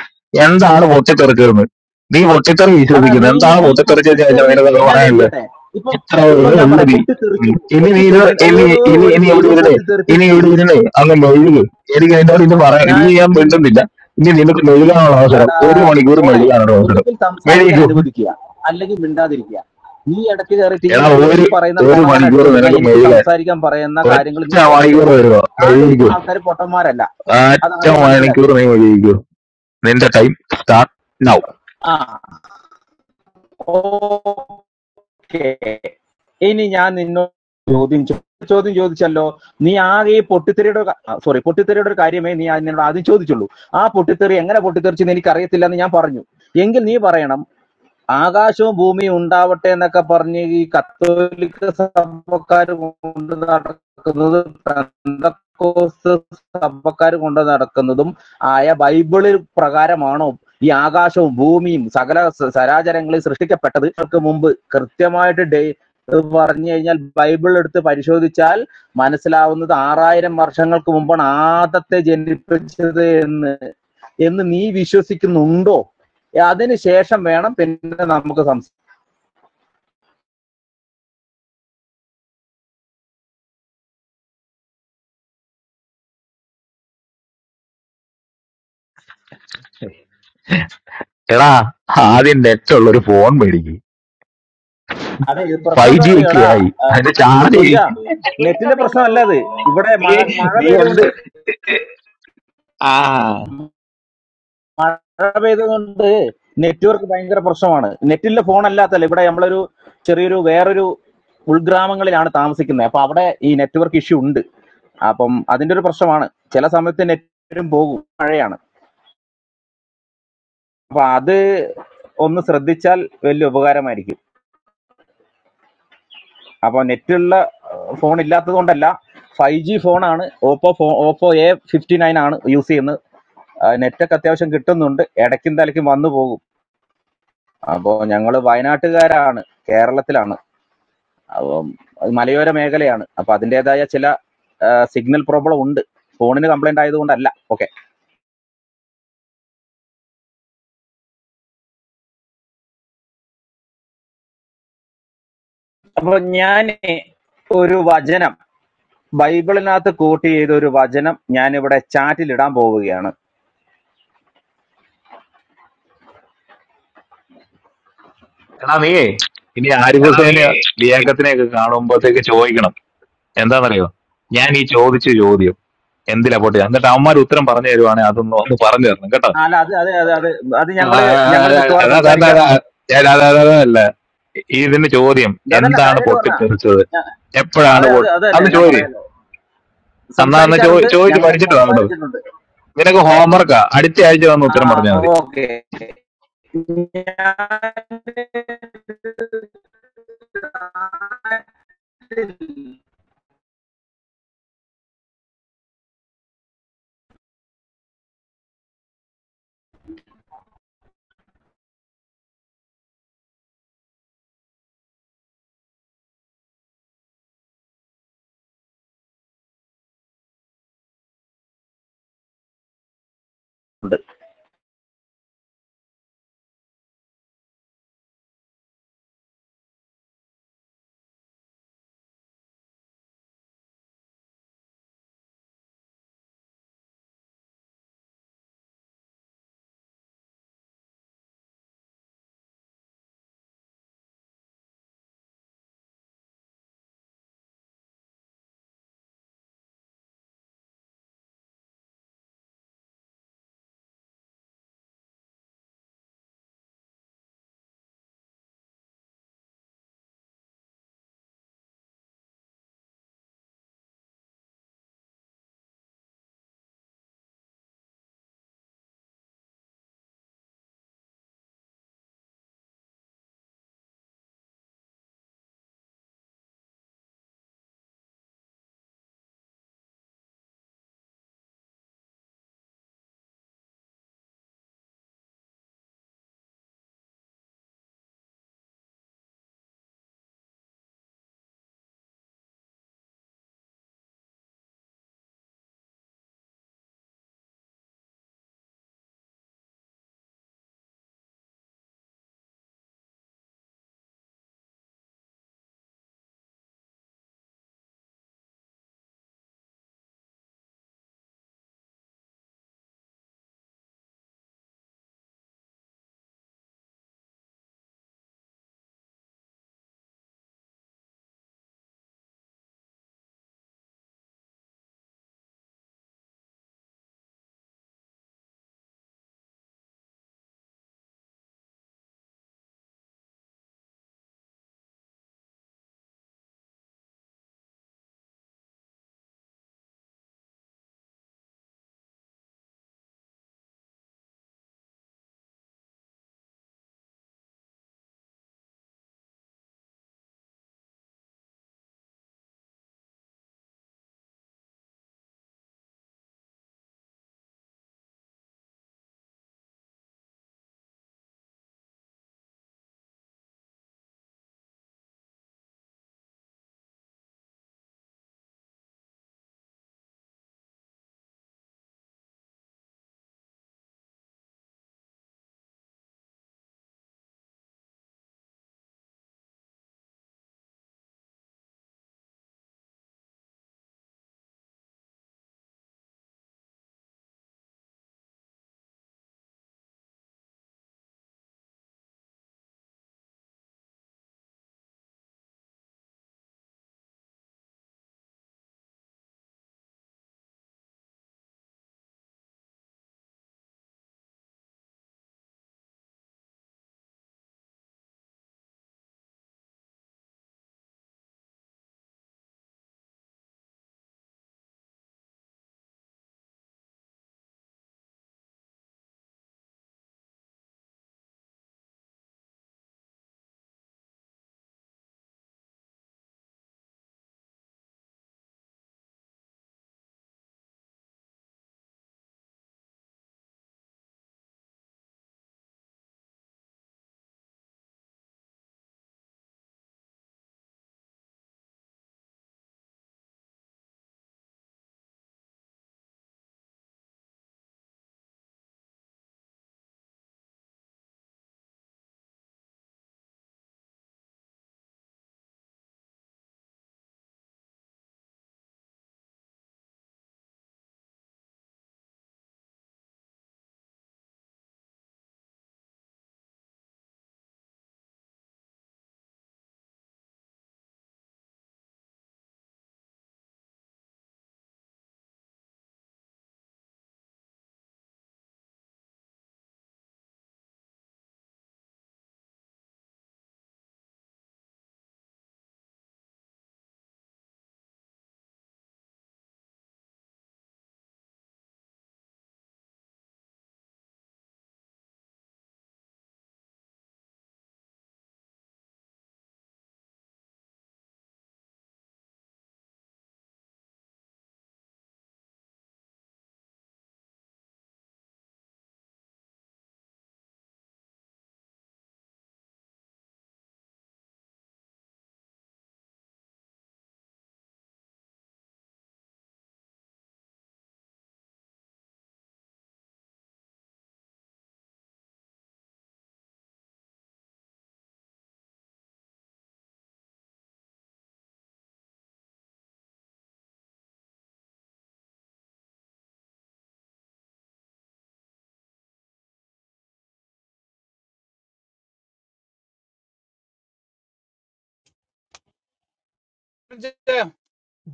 Speaker 27: എന്താണ് പൊട്ടിത്തെറിച്ചതെന്ന് നീ പൊട്ടിത്തെറി
Speaker 26: എടാ നീ
Speaker 27: വിശ്വസിക്കുന്നത് എന്താണ്
Speaker 26: ഈ
Speaker 27: പൊട്ടിത്തെറിച്ചതെന്ന് ചോദിച്ചാൽ
Speaker 26: പൊട്ടിത്തെറി
Speaker 27: നിനക്ക്
Speaker 26: ഞാൻ
Speaker 27: പറയാനുള്ളത്
Speaker 26: ചോദിച്ചോട്ടെ ഇപ്പം
Speaker 27: എത്ര
Speaker 26: ഇപ്പൊ ഞാൻ
Speaker 27: ഉള്ളു
Speaker 26: പറയാം
Speaker 27: നീ ഉം.
Speaker 26: പൊട്ടിത്തെറിച്ചു
Speaker 27: ഇനി
Speaker 26: പൊട്ടി
Speaker 27: നീ ഇത്- ഇനി
Speaker 26: ഏതോ
Speaker 27: ഇനി
Speaker 26: ഒരു
Speaker 27: ഇനി എവിടെ
Speaker 26: ദൈവം
Speaker 27: ഇരുന്നേ ഇനി
Speaker 26: പൊട്ടിത്തെറിപ്പിച്ചു
Speaker 27: ഇവിടെ ഇരുന്നേ അങ്ങ് മെഴുക് എനിക്ക് എന്നോട് ഇന്ന് പറയാം
Speaker 26: ഞാൻ
Speaker 27: ഇനി ഞാൻ
Speaker 26: ഇന്ന്
Speaker 27: മിണ്ടുന്നില്ല ഇനി നിനക്ക് മെഴുകാനുള്ള അവസരം
Speaker 26: എടാ
Speaker 27: ഒരു മണിക്കൂർ
Speaker 26: ഡോണെ
Speaker 27: മെഴുകാനുള്ള അവസരം
Speaker 26: ഒന്നുകിൽ സംസാരിക്കാൻ
Speaker 27: മെഴുകൂ
Speaker 26: അനുവദിക്കുക അല്ലെങ്കിൽ മിണ്ടാതിരിക്കുക നീ ഇടയ്ക്ക് കയറിയിട്ട് ഈ
Speaker 27: എടാ
Speaker 26: ഈ
Speaker 27: ഒരു
Speaker 26: പറയുന്ന
Speaker 27: ഒരു
Speaker 26: കൊണ കൊണ
Speaker 27: മണിക്കൂർ
Speaker 26: അടിച്ചോണ്ടിരുന്ന
Speaker 27: നിനക്ക്
Speaker 26: എനിക്ക്
Speaker 27: മെഴുകാൻ
Speaker 26: സംസാരിക്കാൻ പറയുന്ന കാര്യങ്ങൾ
Speaker 27: ഒറ്റ
Speaker 26: നീ കേൾക്കത്തില്ല
Speaker 27: മണിക്കൂർ തരുമോ
Speaker 26: താഴെ
Speaker 27: മെഴുകൂ
Speaker 26: ഇരിക്കുന്ന ആൾക്കാർ പൊട്ടന്മാരല്ല അത്
Speaker 27: ഒറ്റ
Speaker 26: ആദ്യം
Speaker 27: മണിക്കൂർ
Speaker 26: മനസ്സിലാക്കും
Speaker 27: നീ മെഴുകൂ നിന്റെ ടൈം സ്റ്റാർട്ട് നൗ
Speaker 26: ആ ഓക്കേ. ഇനി ഞാൻ നിന്നോട് ചോദ്യം ചോ- ചോദ്യം ചോദിച്ചല്ലോ നീ ആകെ ഈ പൊട്ടിത്തെറിയുടെ സോറി പൊട്ടിത്തെറിയുടെ ഒരു കാര്യമേ നീ ആ- നിന്നോട് ആദ്യം ചോദിച്ചുള്ളൂ ആ പൊട്ടിത്തെറി എങ്ങനെ പൊട്ടിത്തെറിച്ചെന്ന് എനിക്ക് അറിയത്തില്ല എന്ന് ഞാൻ പറഞ്ഞു എങ്കിൽ നീ പറയണം ആകാശവും ഭൂമിയും ഉണ്ടാവട്ടെ എന്നൊക്കെ പറഞ്ഞ് ഈ കത്തോലിക്ക സഭക്കാർ കൊണ്ട് നടക്കുന്നത് പെന്തക്കോസ്ത് സഭക്കാർ കൊണ്ട് നടക്കുന്നതും ആയ ബൈബിളിൽ പ്രകാരമാണോ ഈ ആകാശവും ഭൂമിയും സകല സ- സരാചരങ്ങളിൽ സൃഷ്ടിക്കപ്പെട്ടത് അവർക്ക് മുമ്പ് കൃത്യമായിട്ട് ഡേ ഇത് പറഞ്ഞു കഴിഞ്ഞാൽ ബൈബിൾ എടുത്ത് പരിശോധിച്ചാൽ മനസ്സിലാവുന്നത് ആറായിരം വർഷങ്ങൾക്ക് മുമ്പാണ് ആദത്തെ ജനിപ്പിച്ചത് എന്ന് എന്ന് നീ വിശ്വസിക്കുന്നുണ്ടോ അതിന് ശേഷം വേണം പിന്നെ നമുക്ക് സംസാരിക്കാം
Speaker 27: എടാ ആദ്യം നെറ്റ് ഉള്ള ഒരു ഫോൺ മേടിക്ക്
Speaker 26: അതെ ഇത് പ്രശ്നം
Speaker 27: ഫൈവ്
Speaker 26: എന്താ
Speaker 27: ജി ഒക്കെ
Speaker 26: അറിയോടാ
Speaker 27: ആയി അതിന്റെ ചാർജ്
Speaker 26: കുഞ്ച നെറ്റിന്റെ പ്രശ്നമല്ല അത് ഇവിടെ മഴ
Speaker 27: നീ
Speaker 26: മഴ
Speaker 27: നീ എന്ത്
Speaker 26: പെയ്തുകൊണ്ട്
Speaker 27: ആ
Speaker 26: മഴ പെയ്തുകൊണ്ട് നെറ്റ്വർക്ക് ഭയങ്കര പ്രശ്നമാണ് നെറ്റിലെ ഫോൺ അല്ലാത്തല്ല ഇവിടെ നമ്മളൊരു ചെറിയൊരു വേറൊരു ഉൾഗ്രാമങ്ങളിലാണ് താമസിക്കുന്നത് അപ്പൊ അവിടെ ഈ നെറ്റ്വർക്ക് ഇഷ്യൂ ഉണ്ട് അപ്പം അതിന്റെ ഒരു പ്രശ്നമാണ് ചില സമയത്ത് നെറ്റും പോകും മഴയാണ് അപ്പൊ അത് ഒന്ന് ശ്രദ്ധിച്ചാൽ വലിയ ഉപകാരമായിരിക്കും അപ്പോൾ നെറ്റുള്ള ഫോൺ ഇല്ലാത്തത് കൊണ്ടല്ല ഫൈവ് ജി ഫോണാണ് ഓപ്പോ ഫോ ഓപ്പോ എ ഫിഫ്റ്റി നയൻ ആണ് യൂസ് ചെയ്യുന്നത് ആ, നെറ്റൊക്കെ അത്യാവശ്യം കിട്ടുന്നുണ്ട് ഇടയ്ക്കും തലയ്ക്കും വന്നു പോകും അപ്പോൾ ഞങ്ങൾ വയനാട്ടുകാരാണ് കേരളത്തിലാണ് അപ്പം അത് മലയോര മേഖലയാണ് അപ്പോൾ അതിൻ്റെതായ ചില സിഗ്നൽ പ്രോബ്ലം ഉണ്ട് ഫോണിന് കംപ്ലൈന്റ് ആയതുകൊണ്ടല്ല ഓക്കെ അപ്പോൾ ഞാൻ ഒരു വചനം ബൈബിളിനകത്ത് കോട്ട് ചെയ്ത ഒരു വചനം ഞാൻ ഇവിടെ ചാറ്റിൽ ഇടാൻ പോവുകയാണ്
Speaker 27: എടാ നീയേ ഇനി ആരിഫ്
Speaker 26: എടാ നീയേ
Speaker 27: ഹുസൈനെയോ ലിയാക്കത്തിനെ ഒക്കെ കാണുമ്പോഴത്തേക്ക് ചോദിക്കണം എന്താണെന്നറിയോ ഞാൻ ഈ ചോദിച്ച ചോദ്യം എന്തിലാ പൊട്ടി എന്നിട്ട് അവന്മാർ ഉത്തരം പറഞ്ഞു തരുവാണെങ്കിൽ അതൊന്ന് ഒന്ന് പറഞ്ഞു തരണം കേട്ടോ
Speaker 26: അല്ല അത് അത് അത് അത് അത്
Speaker 27: ആ,
Speaker 26: ഞങ്ങള് ഞങ്ങള് മിക്കവാറും
Speaker 27: അതാ, അതാ, അതാ, അതാ.
Speaker 26: സംസാരിക്കാറുണ്ട്
Speaker 27: ഞാൻ അതാ, അതാ, അതാ, അല്ല ഇതിന് ചോദ്യം
Speaker 26: അതല്ല
Speaker 27: എന്താണ്
Speaker 26: കാര്യമായിട്ട് പറഞ്ഞ
Speaker 27: പൊട്ടിത്തെറിച്ചത് എപ്പോഴാണ്
Speaker 26: അതെ അതെ
Speaker 27: പൊട്ടി
Speaker 26: അതല്ലേ
Speaker 27: അന്ന്
Speaker 26: ഞാൻ
Speaker 27: ചോദ്യം
Speaker 26: പറയാലോ
Speaker 27: അന്നാ അന്ന് ചോ
Speaker 26: സംസാരിക്കാറുണ്ട്
Speaker 27: ചോദിച്ച്
Speaker 26: ഞങ്ങൾ അത്
Speaker 27: പഠിച്ചിട്ട് വാ കേട്ടോ
Speaker 26: സംസാരിച്ചിട്ടുണ്ട്
Speaker 27: നിനക്ക് ഹോംവർക്കാ അടുത്ത ആഴ്ച വന്ന് ഉത്തരം
Speaker 26: ആ
Speaker 27: പറഞ്ഞാൽ മതി
Speaker 26: ഓക്കെ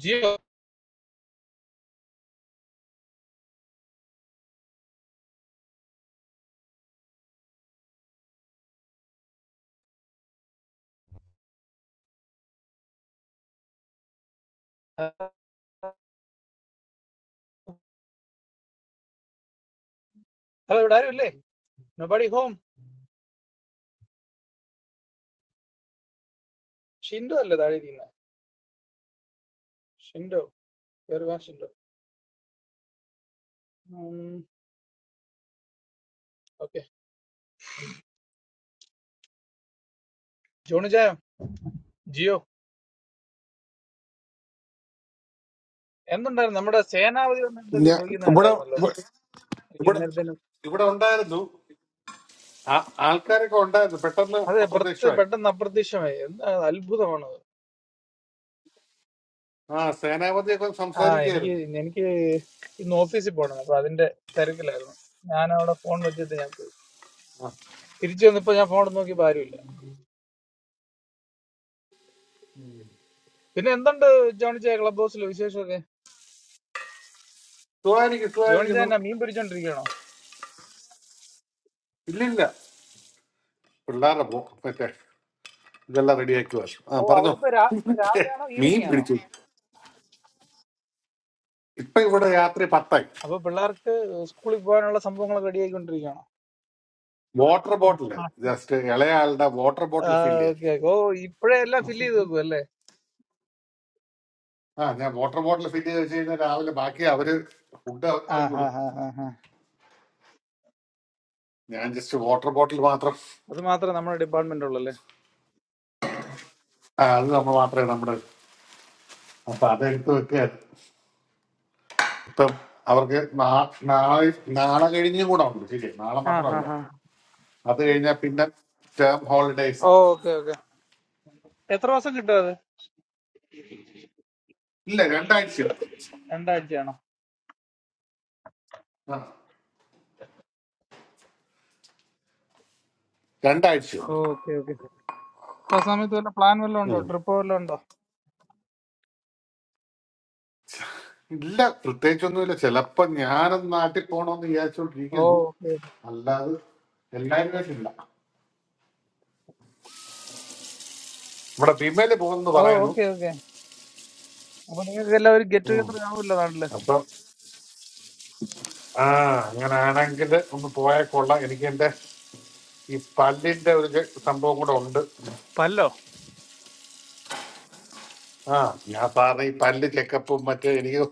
Speaker 24: ജിയോ അതെ ഇവിടെ ആരും ഇല്ലേ നൊബഡി ഹോം ഷിൻഡോ അല്ലേ താഴെ ഇരിക്കുന്നത് ഷിൻഡോ കയറുക ഷിൻഡോ ഓക്കെ ജോണി ജായോ ജിയോ എന്തുണ്ടായിരുന്നു നമ്മുടെ സേനാപതി വന്ന് എന്തൊക്കെ
Speaker 11: ഞാ-
Speaker 24: ചോദിക്കുന്നത്
Speaker 11: ഇവിടെ
Speaker 24: കേട്ടായിരുന്നല്ലോ
Speaker 11: ഇവിടെ
Speaker 24: എനിക്ക്
Speaker 11: ഇവിടെ
Speaker 24: അന്നേരത്തേനും
Speaker 11: ഇവിടെ ഉണ്ടായിരുന്നു ആ- ആൾക്കാരൊക്കെ ഉണ്ടായിരുന്നു പെട്ടെന്ന്
Speaker 24: അതെ പെർത്ത്
Speaker 11: അപ്രത്യക്ഷമായി
Speaker 24: പെട്ടെന്ന് അപ്രത്യക്ഷമായി എന്താ അത്ഭുതമാണ് അത്.
Speaker 11: ആ സേനാപതിയൊക്കെ
Speaker 24: ആ എനിക്ക്
Speaker 11: സംസാരിക്കുകയായിരുന്നു
Speaker 24: എനിക്ക് ഇന്ന് ഓഫീസിൽ പോകണം അപ്പൊ അതിന്റെ തിരക്കിലായിരുന്നു ഞാൻ അവിടെ ഫോൺ വെച്ചിട്ട് ഞാൻ പോയി
Speaker 11: ആ,
Speaker 24: തിരിച്ചു വന്നപ്പോ ഞാൻ ഫോൺ നോക്കിയപ്പോ ആരുമില്ല പിന്നെ എന്തുണ്ട് ജോണിച്ചായ ക്ലബ് ഹൗസിലെ വിശേഷമൊക്കെ
Speaker 11: സുഖമായിരിക്കും
Speaker 24: ജോണിച്ചായ
Speaker 11: സുഖമായിരിക്കുന്നു
Speaker 24: എന്നാ മീൻ പിടിച്ചോണ്ടിരിക്കണോ
Speaker 11: ഇല്ലില്ല പിള്ളേരുടെ പോ മറ്റേ ഇതെല്ലാം റെഡിയാക്കി വാശു ആ
Speaker 24: ഓ
Speaker 11: പറഞ്ഞോ
Speaker 24: അവിടെ ഇപ്പൊ രാ- രാവിലെ ആണോ
Speaker 11: മീൻ
Speaker 24: ഈവനിങ് ആണോ
Speaker 11: പിടിച്ചു ഇപ്പൊ ഇവിടെ രാത്രി പത്തായി
Speaker 24: അപ്പൊ പിള്ളേർക്ക് സ്കൂളിൽ പോകാനുള്ള സംഭവങ്ങളൊക്കെ റെഡിയായിക്കൊണ്ടിരിക്കണോ
Speaker 11: വാട്ടർ ബോട്ടിൽ ജസ്റ്റ് ഇളയാളുടെ വാട്ടർ
Speaker 24: ആ
Speaker 11: ബോട്ടിൽ ഫില്ല്
Speaker 24: ഓക്കെ ഓ ഇപ്പഴേ എല്ലാം ഫില്ല് ചെയ്ത്
Speaker 11: ചെയ്യാൻ
Speaker 24: വെക്കും അല്ലേ
Speaker 11: ആ ഞാൻ വാട്ടർ ബോട്ടിൽ ഫില്ല് ചെയ്ത് വെച്ച് കഴിഞ്ഞാൽ രാവിലെ ബാക്കി അവര് ഫുഡ് അവർ
Speaker 24: ആ ഹാ
Speaker 11: നോക്കിക്കോളും
Speaker 24: ഹാ ഹാ
Speaker 11: ഞാൻ ജസ്റ്റ് വാട്ടർ ബോട്ടിൽ മാത്രം
Speaker 24: അത് മാത്രമേ നമ്മുടെ ഡിപ്പാർട്ട്മെന്റ് ഉള്ളല്ലേ
Speaker 11: ആ അത് നമ്മൾ മാത്രമേ നമ്മുടെ അപ്പൊ അതെടുത്ത് വെക്കുകയാണ് ഇപ്പം അവർക്ക് നാ- നാളെ നാളെ കഴിഞ്ഞും കൂടെ ഉണ്ട് ശരിയാ നാളെ
Speaker 24: ആ ഹാ
Speaker 11: മാത്രമല്ല
Speaker 24: ഹാ
Speaker 11: അത് കഴിഞ്ഞാൽ പിന്നെ ടേം ഹോളിഡേസ് ആണ്
Speaker 24: ഓക്കെ ഓക്കെ എത്ര ദിവസം കിട്ടും അത്
Speaker 11: ഇല്ല രണ്ടാഴ്ചയുള്ളൂ
Speaker 24: രണ്ടാഴ്ചയാണോ
Speaker 11: ആ രണ്ടാഴ്ചയുള്ളൂ
Speaker 24: ഓക്കെ ഓക്കെ അപ്പൊ ആ സമയത്ത് വല്ല പ്ലാൻ വല്ലതും ഉണ്ടോ
Speaker 11: ഉം.
Speaker 24: ട്രിപ്പ് വല്ലതും ഉണ്ടോ
Speaker 11: ഇല്ല പ്രത്യേകിച്ചൊന്നുമില്ല ചിലപ്പോ ഞാനും നാട്ടിൽ പോണോന്ന്
Speaker 24: ഓ
Speaker 11: വിചാരിച്ചോണ്ടിരിക്കുന്നു
Speaker 24: ഓക്കെ ഓക്കെ.
Speaker 11: അല്ലാതെ എല്ലാരും ആയിട്ടില്ല ഇവിടെ ഭീമയില് പോകുന്നു
Speaker 24: ഓ
Speaker 11: പറയുന്നു
Speaker 24: ഓക്കെ ഓക്കെ അപ്പൊ നിങ്ങൾക്ക് എല്ലാം ഒരു ഗെറ്റ്
Speaker 11: ഉം.
Speaker 24: ടുഗദർ ആവുമല്ലോ നാട്ടില്
Speaker 11: അപ്പൊ ആ അങ്ങനെ ആണെങ്കിൽ ഒന്ന് പോയാൽ കൊള്ളാം എനിക്ക് എന്റെ ഈ പല്ലിന്റെ ഒരു ചെ- സംഭവം കൂടെ ഉണ്ട്
Speaker 24: പല്ലോ
Speaker 11: ആ ഞാൻ സാറിന് ഈ പല്ല് ചെക്കപ്പും മറ്റേ എനിക്ക്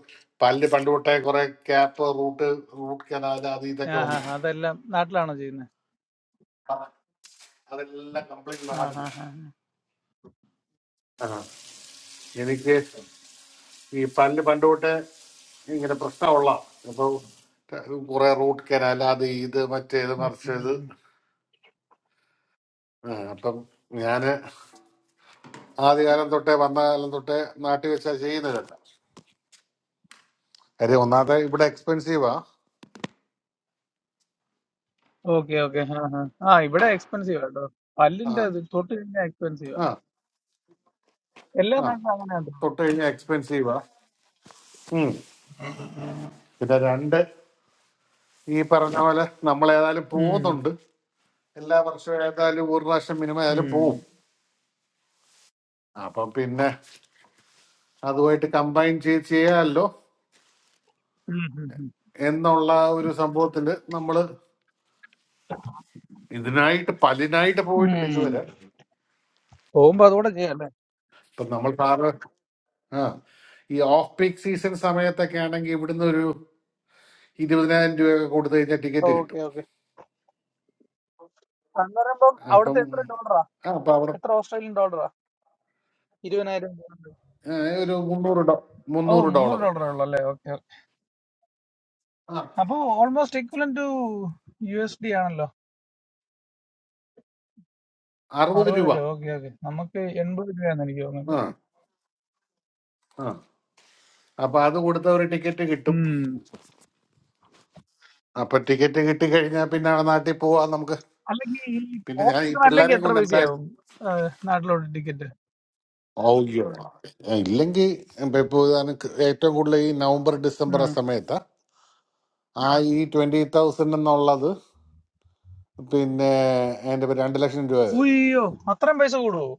Speaker 11: പല്ല് പണ്ട് തൊട്ടേ കുറെ ക്യാപ്പ് റൂട്ട് റൂട്ട് കനാൽ അത് ഇതൊക്കെ
Speaker 24: ആ ഹാ
Speaker 11: ഉണ്ട്
Speaker 24: ഹാ, അതെല്ലാം നാട്ടിലാണോ ചെയ്യുന്നത്
Speaker 11: ആ, അതെല്ലാം കംപ്ലീറ്റ്
Speaker 24: ആ
Speaker 11: നാടില്ല
Speaker 24: ഹാ ഹാ
Speaker 11: ആ എനിക്ക് ഈ പല്ല് പണ്ട് തൊട്ട് ഇങ്ങനെ പ്രശ്നമുള്ള അപ്പോൾ കുറെ റൂട്ട് കനാൽ അത് ഇത് മറ്റേത് മറിച്ചത് ആ, അപ്പം ഞാന് ആദ്യകാലം തൊട്ടേ വന്ന കാലം തൊട്ടേ നാട്ടിൽ വെച്ചാ ചെയ്യുന്നതല്ല കാര്യം ഒന്നാമത്തെ ഇവിടെ എക്സ്പെൻസീവാ
Speaker 24: ഓക്കെ ഓക്കെ ആ ഹാ ആ ഇവിടെ എക്സ്പെൻസീവ് കേട്ടോ
Speaker 11: ആ
Speaker 24: പല്ലിന്റെ ഇത് തൊട്ട് കഴിഞ്ഞാൽ എക്സ്പെൻസീവാ
Speaker 11: ആ
Speaker 24: എല്ലാ
Speaker 11: ആ
Speaker 24: നാട്ടിലും അങ്ങനെ ഉണ്ടോ
Speaker 11: തൊട്ട് കഴിഞ്ഞാൽ എക്സ്പെൻസീവാ ഉം. പിന്നെ രണ്ട് ഈ പറഞ്ഞ പോലെ നമ്മൾ ഏതായാലും
Speaker 24: ഉം
Speaker 11: പോകുന്നുണ്ട് എല്ലാ വർഷവും ഏതായാലും ഒരു പ്രാവശ്യം മിനിമം ഏതായാലും
Speaker 24: ഉം
Speaker 11: പോവും അപ്പം പിന്നെ അതുമായിട്ട് കമ്പൈൻ ചെയ്ത് ചെയ്യാമല്ലോ
Speaker 24: ഉം ഉം ഉം
Speaker 11: എന്നുള്ള ഒരു സംഭവത്തില് നമ്മള് ഇതിനായിട്ട് പലിനായിട്ട് പോയിട്ടില്ല
Speaker 24: ഉം.
Speaker 11: ഇതുവരെ
Speaker 24: പോകുമ്പോ അതുകൂടെ ചെയ്യാം
Speaker 11: ഇപ്പൊ നമ്മൾ സാറ് ആ ഈ ഓഫ് പീക്ക് സീസൺ സമയത്തൊക്കെ ആണെങ്കിൽ ഇവിടുന്ന് ഒരു ഇരുപതിനായിരം രൂപയൊക്കെ കൊടുത്തു കഴിഞ്ഞാൽ ടിക്കറ്റ്
Speaker 24: ഓക്കെ
Speaker 11: കിട്ടും
Speaker 24: ഓക്കെ അന്ന് പറയുമ്പം
Speaker 11: അപ്പം
Speaker 24: അവിടുത്തെ എത്ര ഡോളറാ
Speaker 11: ആ അപ്പൊ അവിടെ
Speaker 24: എത്ര ഓസ്ട്രേലിയൻ ഡോളറാ ഇരുപതിനായിരം ഡോളർ
Speaker 11: ഏ, ഒരു മുന്നൂറ് ഡോ
Speaker 24: ഓ
Speaker 11: മുന്നൂറ്
Speaker 24: മുന്നൂറ്
Speaker 11: ഡോളർ
Speaker 24: ഡോളറേ ഉള്ളൂ അല്ലേ ഓക്കെ ഓക്കെ
Speaker 11: ആ
Speaker 24: അപ്പോ almost equivalent to U S D ആണല്ലോ
Speaker 11: അറുപത്
Speaker 24: അറുപത്
Speaker 11: രൂപ
Speaker 24: രൂപ ഓക്കെ ഓക്കെ നമുക്ക് എൺപത് രൂപയാന്ന് എനിക്ക് തോന്നുന്നു
Speaker 11: ആ ആ അപ്പൊ അത് കൊടുത്ത ഒരു ടിക്കറ്റ് കിട്ടും
Speaker 24: ഉം.
Speaker 11: അപ്പൊ ടിക്കറ്റ് കിട്ടിക്കഴിഞ്ഞാൽ പിന്നെ നാട്ടിൽ പോവാൻ നമുക്ക്
Speaker 24: അല്ലെങ്കിൽ ഈ
Speaker 11: പിന്നെ ഞാൻ ഈ
Speaker 24: ഓസ്ട്രേലിയൻ അല്ലെങ്കിൽ
Speaker 11: പിള്ളേരെ
Speaker 24: എത്ര
Speaker 11: കൊണ്ട് എന്തായാലും
Speaker 24: പൈസയാവും ആ, നാട്ടിലോട്ട് ടിക്കറ്റ്
Speaker 11: ഔയ്യോ. ഇല്ലെങ്കിൽ ഇപ്പൊ ഇതാണ് ക- ഏറ്റവും കൂടുതൽ ഈ നവംബർ ഡിസംബർ ആ സമയത്താ ആ ഈ ട്വന്റി തൗസൻഡ് എന്നുള്ളത് പിന്നെ എന്റെ രണ്ട് ലക്ഷം രൂപ വരും
Speaker 24: ഉയ്യോ അത്രയും പൈസ കൂടുവോ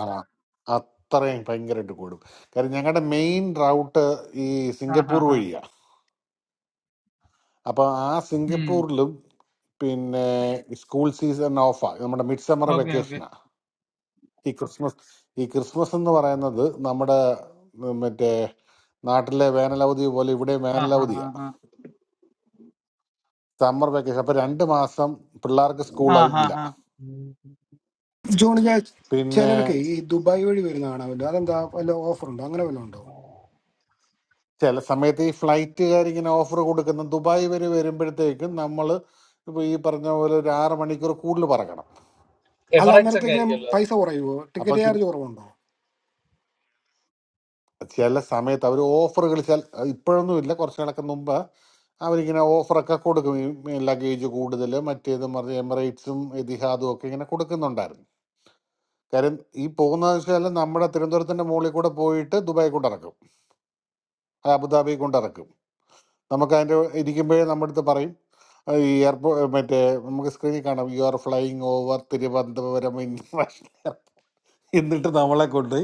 Speaker 11: ആ അത്രയും ഭയങ്കരമായിട്ട് കൂടും കാര്യം ഞങ്ങളുടെ മെയിൻ റൗട്ട് ഈ
Speaker 24: ആ ഹാ
Speaker 11: സിംഗപ്പൂർ
Speaker 24: ഹാ
Speaker 11: വഴിയാ അപ്പൊ ആ
Speaker 24: ഉം
Speaker 11: സിംഗപ്പൂരിലും പിന്നെ സ്കൂൾ സീസൺ ഓഫാ നമ്മുടെ മിഡ് സമ്മർ
Speaker 24: ഓക്കെ ഓക്കെ
Speaker 11: വെക്കേഷനാ ഈ ക്രിസ്മസ് ഈ ക്രിസ്മസ് എന്ന് പറയുന്നത് നമ്മുടെ ഉം, മറ്റേ നാട്ടിലെ വേനലവധി പോലെ ഇവിടെ
Speaker 24: ആ ഹാ ഹാ
Speaker 11: വേനലവധിയാ
Speaker 24: ഹാ
Speaker 11: സമ്മർ വെക്കേഷൻ അപ്പൊ രണ്ട് മാസം പിള്ളേർക്ക് സ്കൂൾ
Speaker 24: ആ ഹാ
Speaker 11: ഇല്ല
Speaker 24: ഹാ
Speaker 1: ജോണി ഞാൻ
Speaker 11: പിന്നെ
Speaker 1: ചിലരൊക്കെ ഈ ദുബായ് വഴി വരുന്ന കാണാൻ പറ്റും അതെന്താ വല്ല ഓഫർ ഉണ്ടോ അങ്ങനെ വല്ലതും ഉണ്ടോ
Speaker 11: ചില സമയത്ത് ഈ ഫ്ലൈറ്റുകാർ ഇങ്ങനെ ഓഫർ കൊടുക്കുന്ന ദുബായ് വരെ വരുമ്പോഴത്തേക്കും നമ്മൾ ഇപ്പൊ ഈ പറഞ്ഞ പോലെ ഒരു ആറ് മണിക്കൂർ കൂടുതൽ പറക്കണം
Speaker 1: അല്ല
Speaker 24: എമറേറ്റ്സ് ഒക്കെ
Speaker 1: അന്നേരത്തേക്കിനും
Speaker 24: ആയിരിക്കുമല്ലോ അത്.
Speaker 1: പൈസ കുറയുമോ
Speaker 11: അപ്പൊ
Speaker 1: ടിക്കറ്റ് ചാർജ്
Speaker 11: ചി-
Speaker 1: കുറവുണ്ടോ
Speaker 11: ചില സമയത്ത് അവർ ഓഫറുകൾ ചില ഇപ്പോഴൊന്നും ഇല്ല കുറച്ച് നാളൊക്കെ മുമ്പ് അവരിങ്ങനെ ഓഫറൊക്കെ കൊടുക്കും ഈ ലഗേജ് കൂടുതൽ മറ്റേത് പറഞ്ഞ എമിറേറ്റ്സും എതിഹാദും ഒക്കെ ഇങ്ങനെ കൊടുക്കുന്നുണ്ടായിരുന്നു കാര്യം ഈ പോകുന്നതെന്ന് വെച്ചാൽ നമ്മുടെ തിരുവനന്തപുരത്തിന്റെ മുകളിൽ കൂടെ പോയിട്ട് ദുബായി കൊണ്ടിറക്കും അബുദാബി കൊണ്ടിറക്കും നമുക്ക് അതിൻ്റെ ഇരിക്കുമ്പോഴേ നമ്മുടെ അടുത്ത് പറയും അഹ് ഈ എയർപോർട്ട് മറ്റേ നമുക്ക് സ്ക്രീനിൽ കാണാം you are flying over Thiruvananthapuram international airport എന്നിട്ട് നമ്മളെ കൊണ്ട്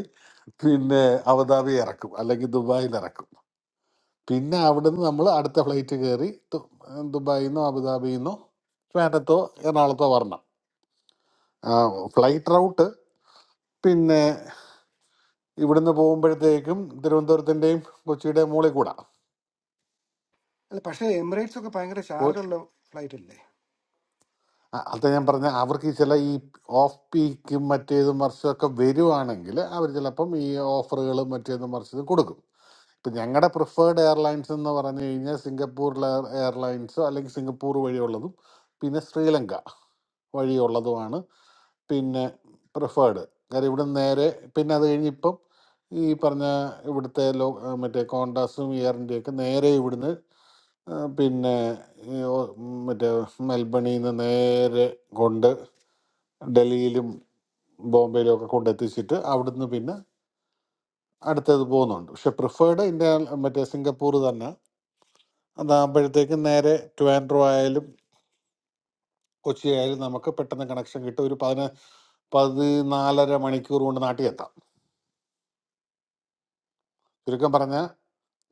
Speaker 11: പിന്നെ അബുദാബി ഇറക്കും അല്ലെങ്കിൽ ദുബായിൽ ഇറക്കും പിന്നെ അവിടുന്ന് നമ്മൾ അടുത്ത ഫ്ലൈറ്റ് കയറി ദു- ദുബായിൽ നിന്നോ അബുദാബിയിൽ നിന്നോ ട്രാൻഡത്തോ എറണാകുളത്തോ വരണം ആ, ഫ്ലൈറ്റ് റൗട്ട് പിന്നെ ഇവിടുന്ന് പോകുമ്പോഴത്തേക്കും തിരുവനന്തപുരത്തിൻ്റെയും കൊച്ചിയുടെയും മുകളിൽ കൂടാ
Speaker 1: അല്ല പക്ഷേ എമിറേറ്റ്സ് ഒക്കെ ഭയങ്കര ചാർജ് ഉള്ള ഫ്ലൈറ്റ് അല്ലേ
Speaker 11: ആ, അത് ഞാൻ പറഞ്ഞ അവർക്ക് ഈ ചില ഈ ഓഫ് പീക്കും മറ്റേതും മറിച്ചതൊക്കെ വരുവാണെങ്കിൽ അവർ ചിലപ്പം ഈ ഓഫറുകളും മറ്റേതും മറിച്ചതും കൊടുക്കും ഇപ്പം ഞങ്ങളുടെ പ്രിഫേർഡ് എയർലൈൻസ് എന്ന് പറഞ്ഞു കഴിഞ്ഞാൽ സിംഗപ്പൂർ എയർലൈൻസോ അല്ലെങ്കിൽ സിംഗപ്പൂർ വഴിയുള്ളതും പിന്നെ ശ്രീലങ്ക വഴിയുള്ളതുമാണ് പിന്നെ പ്രിഫേർഡ് കാര്യം ഇവിടെ നേരെ പിന്നെ അത് കഴിഞ്ഞ് ഇപ്പം ഈ പറഞ്ഞ ഇവിടുത്തെ ലോ മറ്റേ കോണ്ടാസും ഇയറിൻ്റെയൊക്കെ നേരെ ഇവിടുന്ന് ആ, പിന്നെ ഈ ഓ- മറ്റേ മെൽബണിൽ നിന്ന് നേരെ കൊണ്ട് ഡൽഹിയിലും ബോംബെയിലും ഒക്കെ കൊണ്ടെത്തിച്ചിട്ട് അവിടുന്ന് പിന്നെ അടുത്തത് പോകുന്നുണ്ട് പക്ഷെ പ്രിഫേർഡ് ഇന്ത്യ മറ്റേ സിംഗപ്പൂർ തന്നെ അതാകുമ്പോഴത്തേക്കും നേരെ ട്വാൻഡ്രോ ആയാലും കൊച്ചി ആയാലും നമുക്ക് പെട്ടെന്ന് കണക്ഷൻ കിട്ടും ഒരു പതിന പതിനാലര മണിക്കൂർ കൊണ്ട് നാട്ടിൽ എത്താം ചുരുക്കം പറഞ്ഞാൽ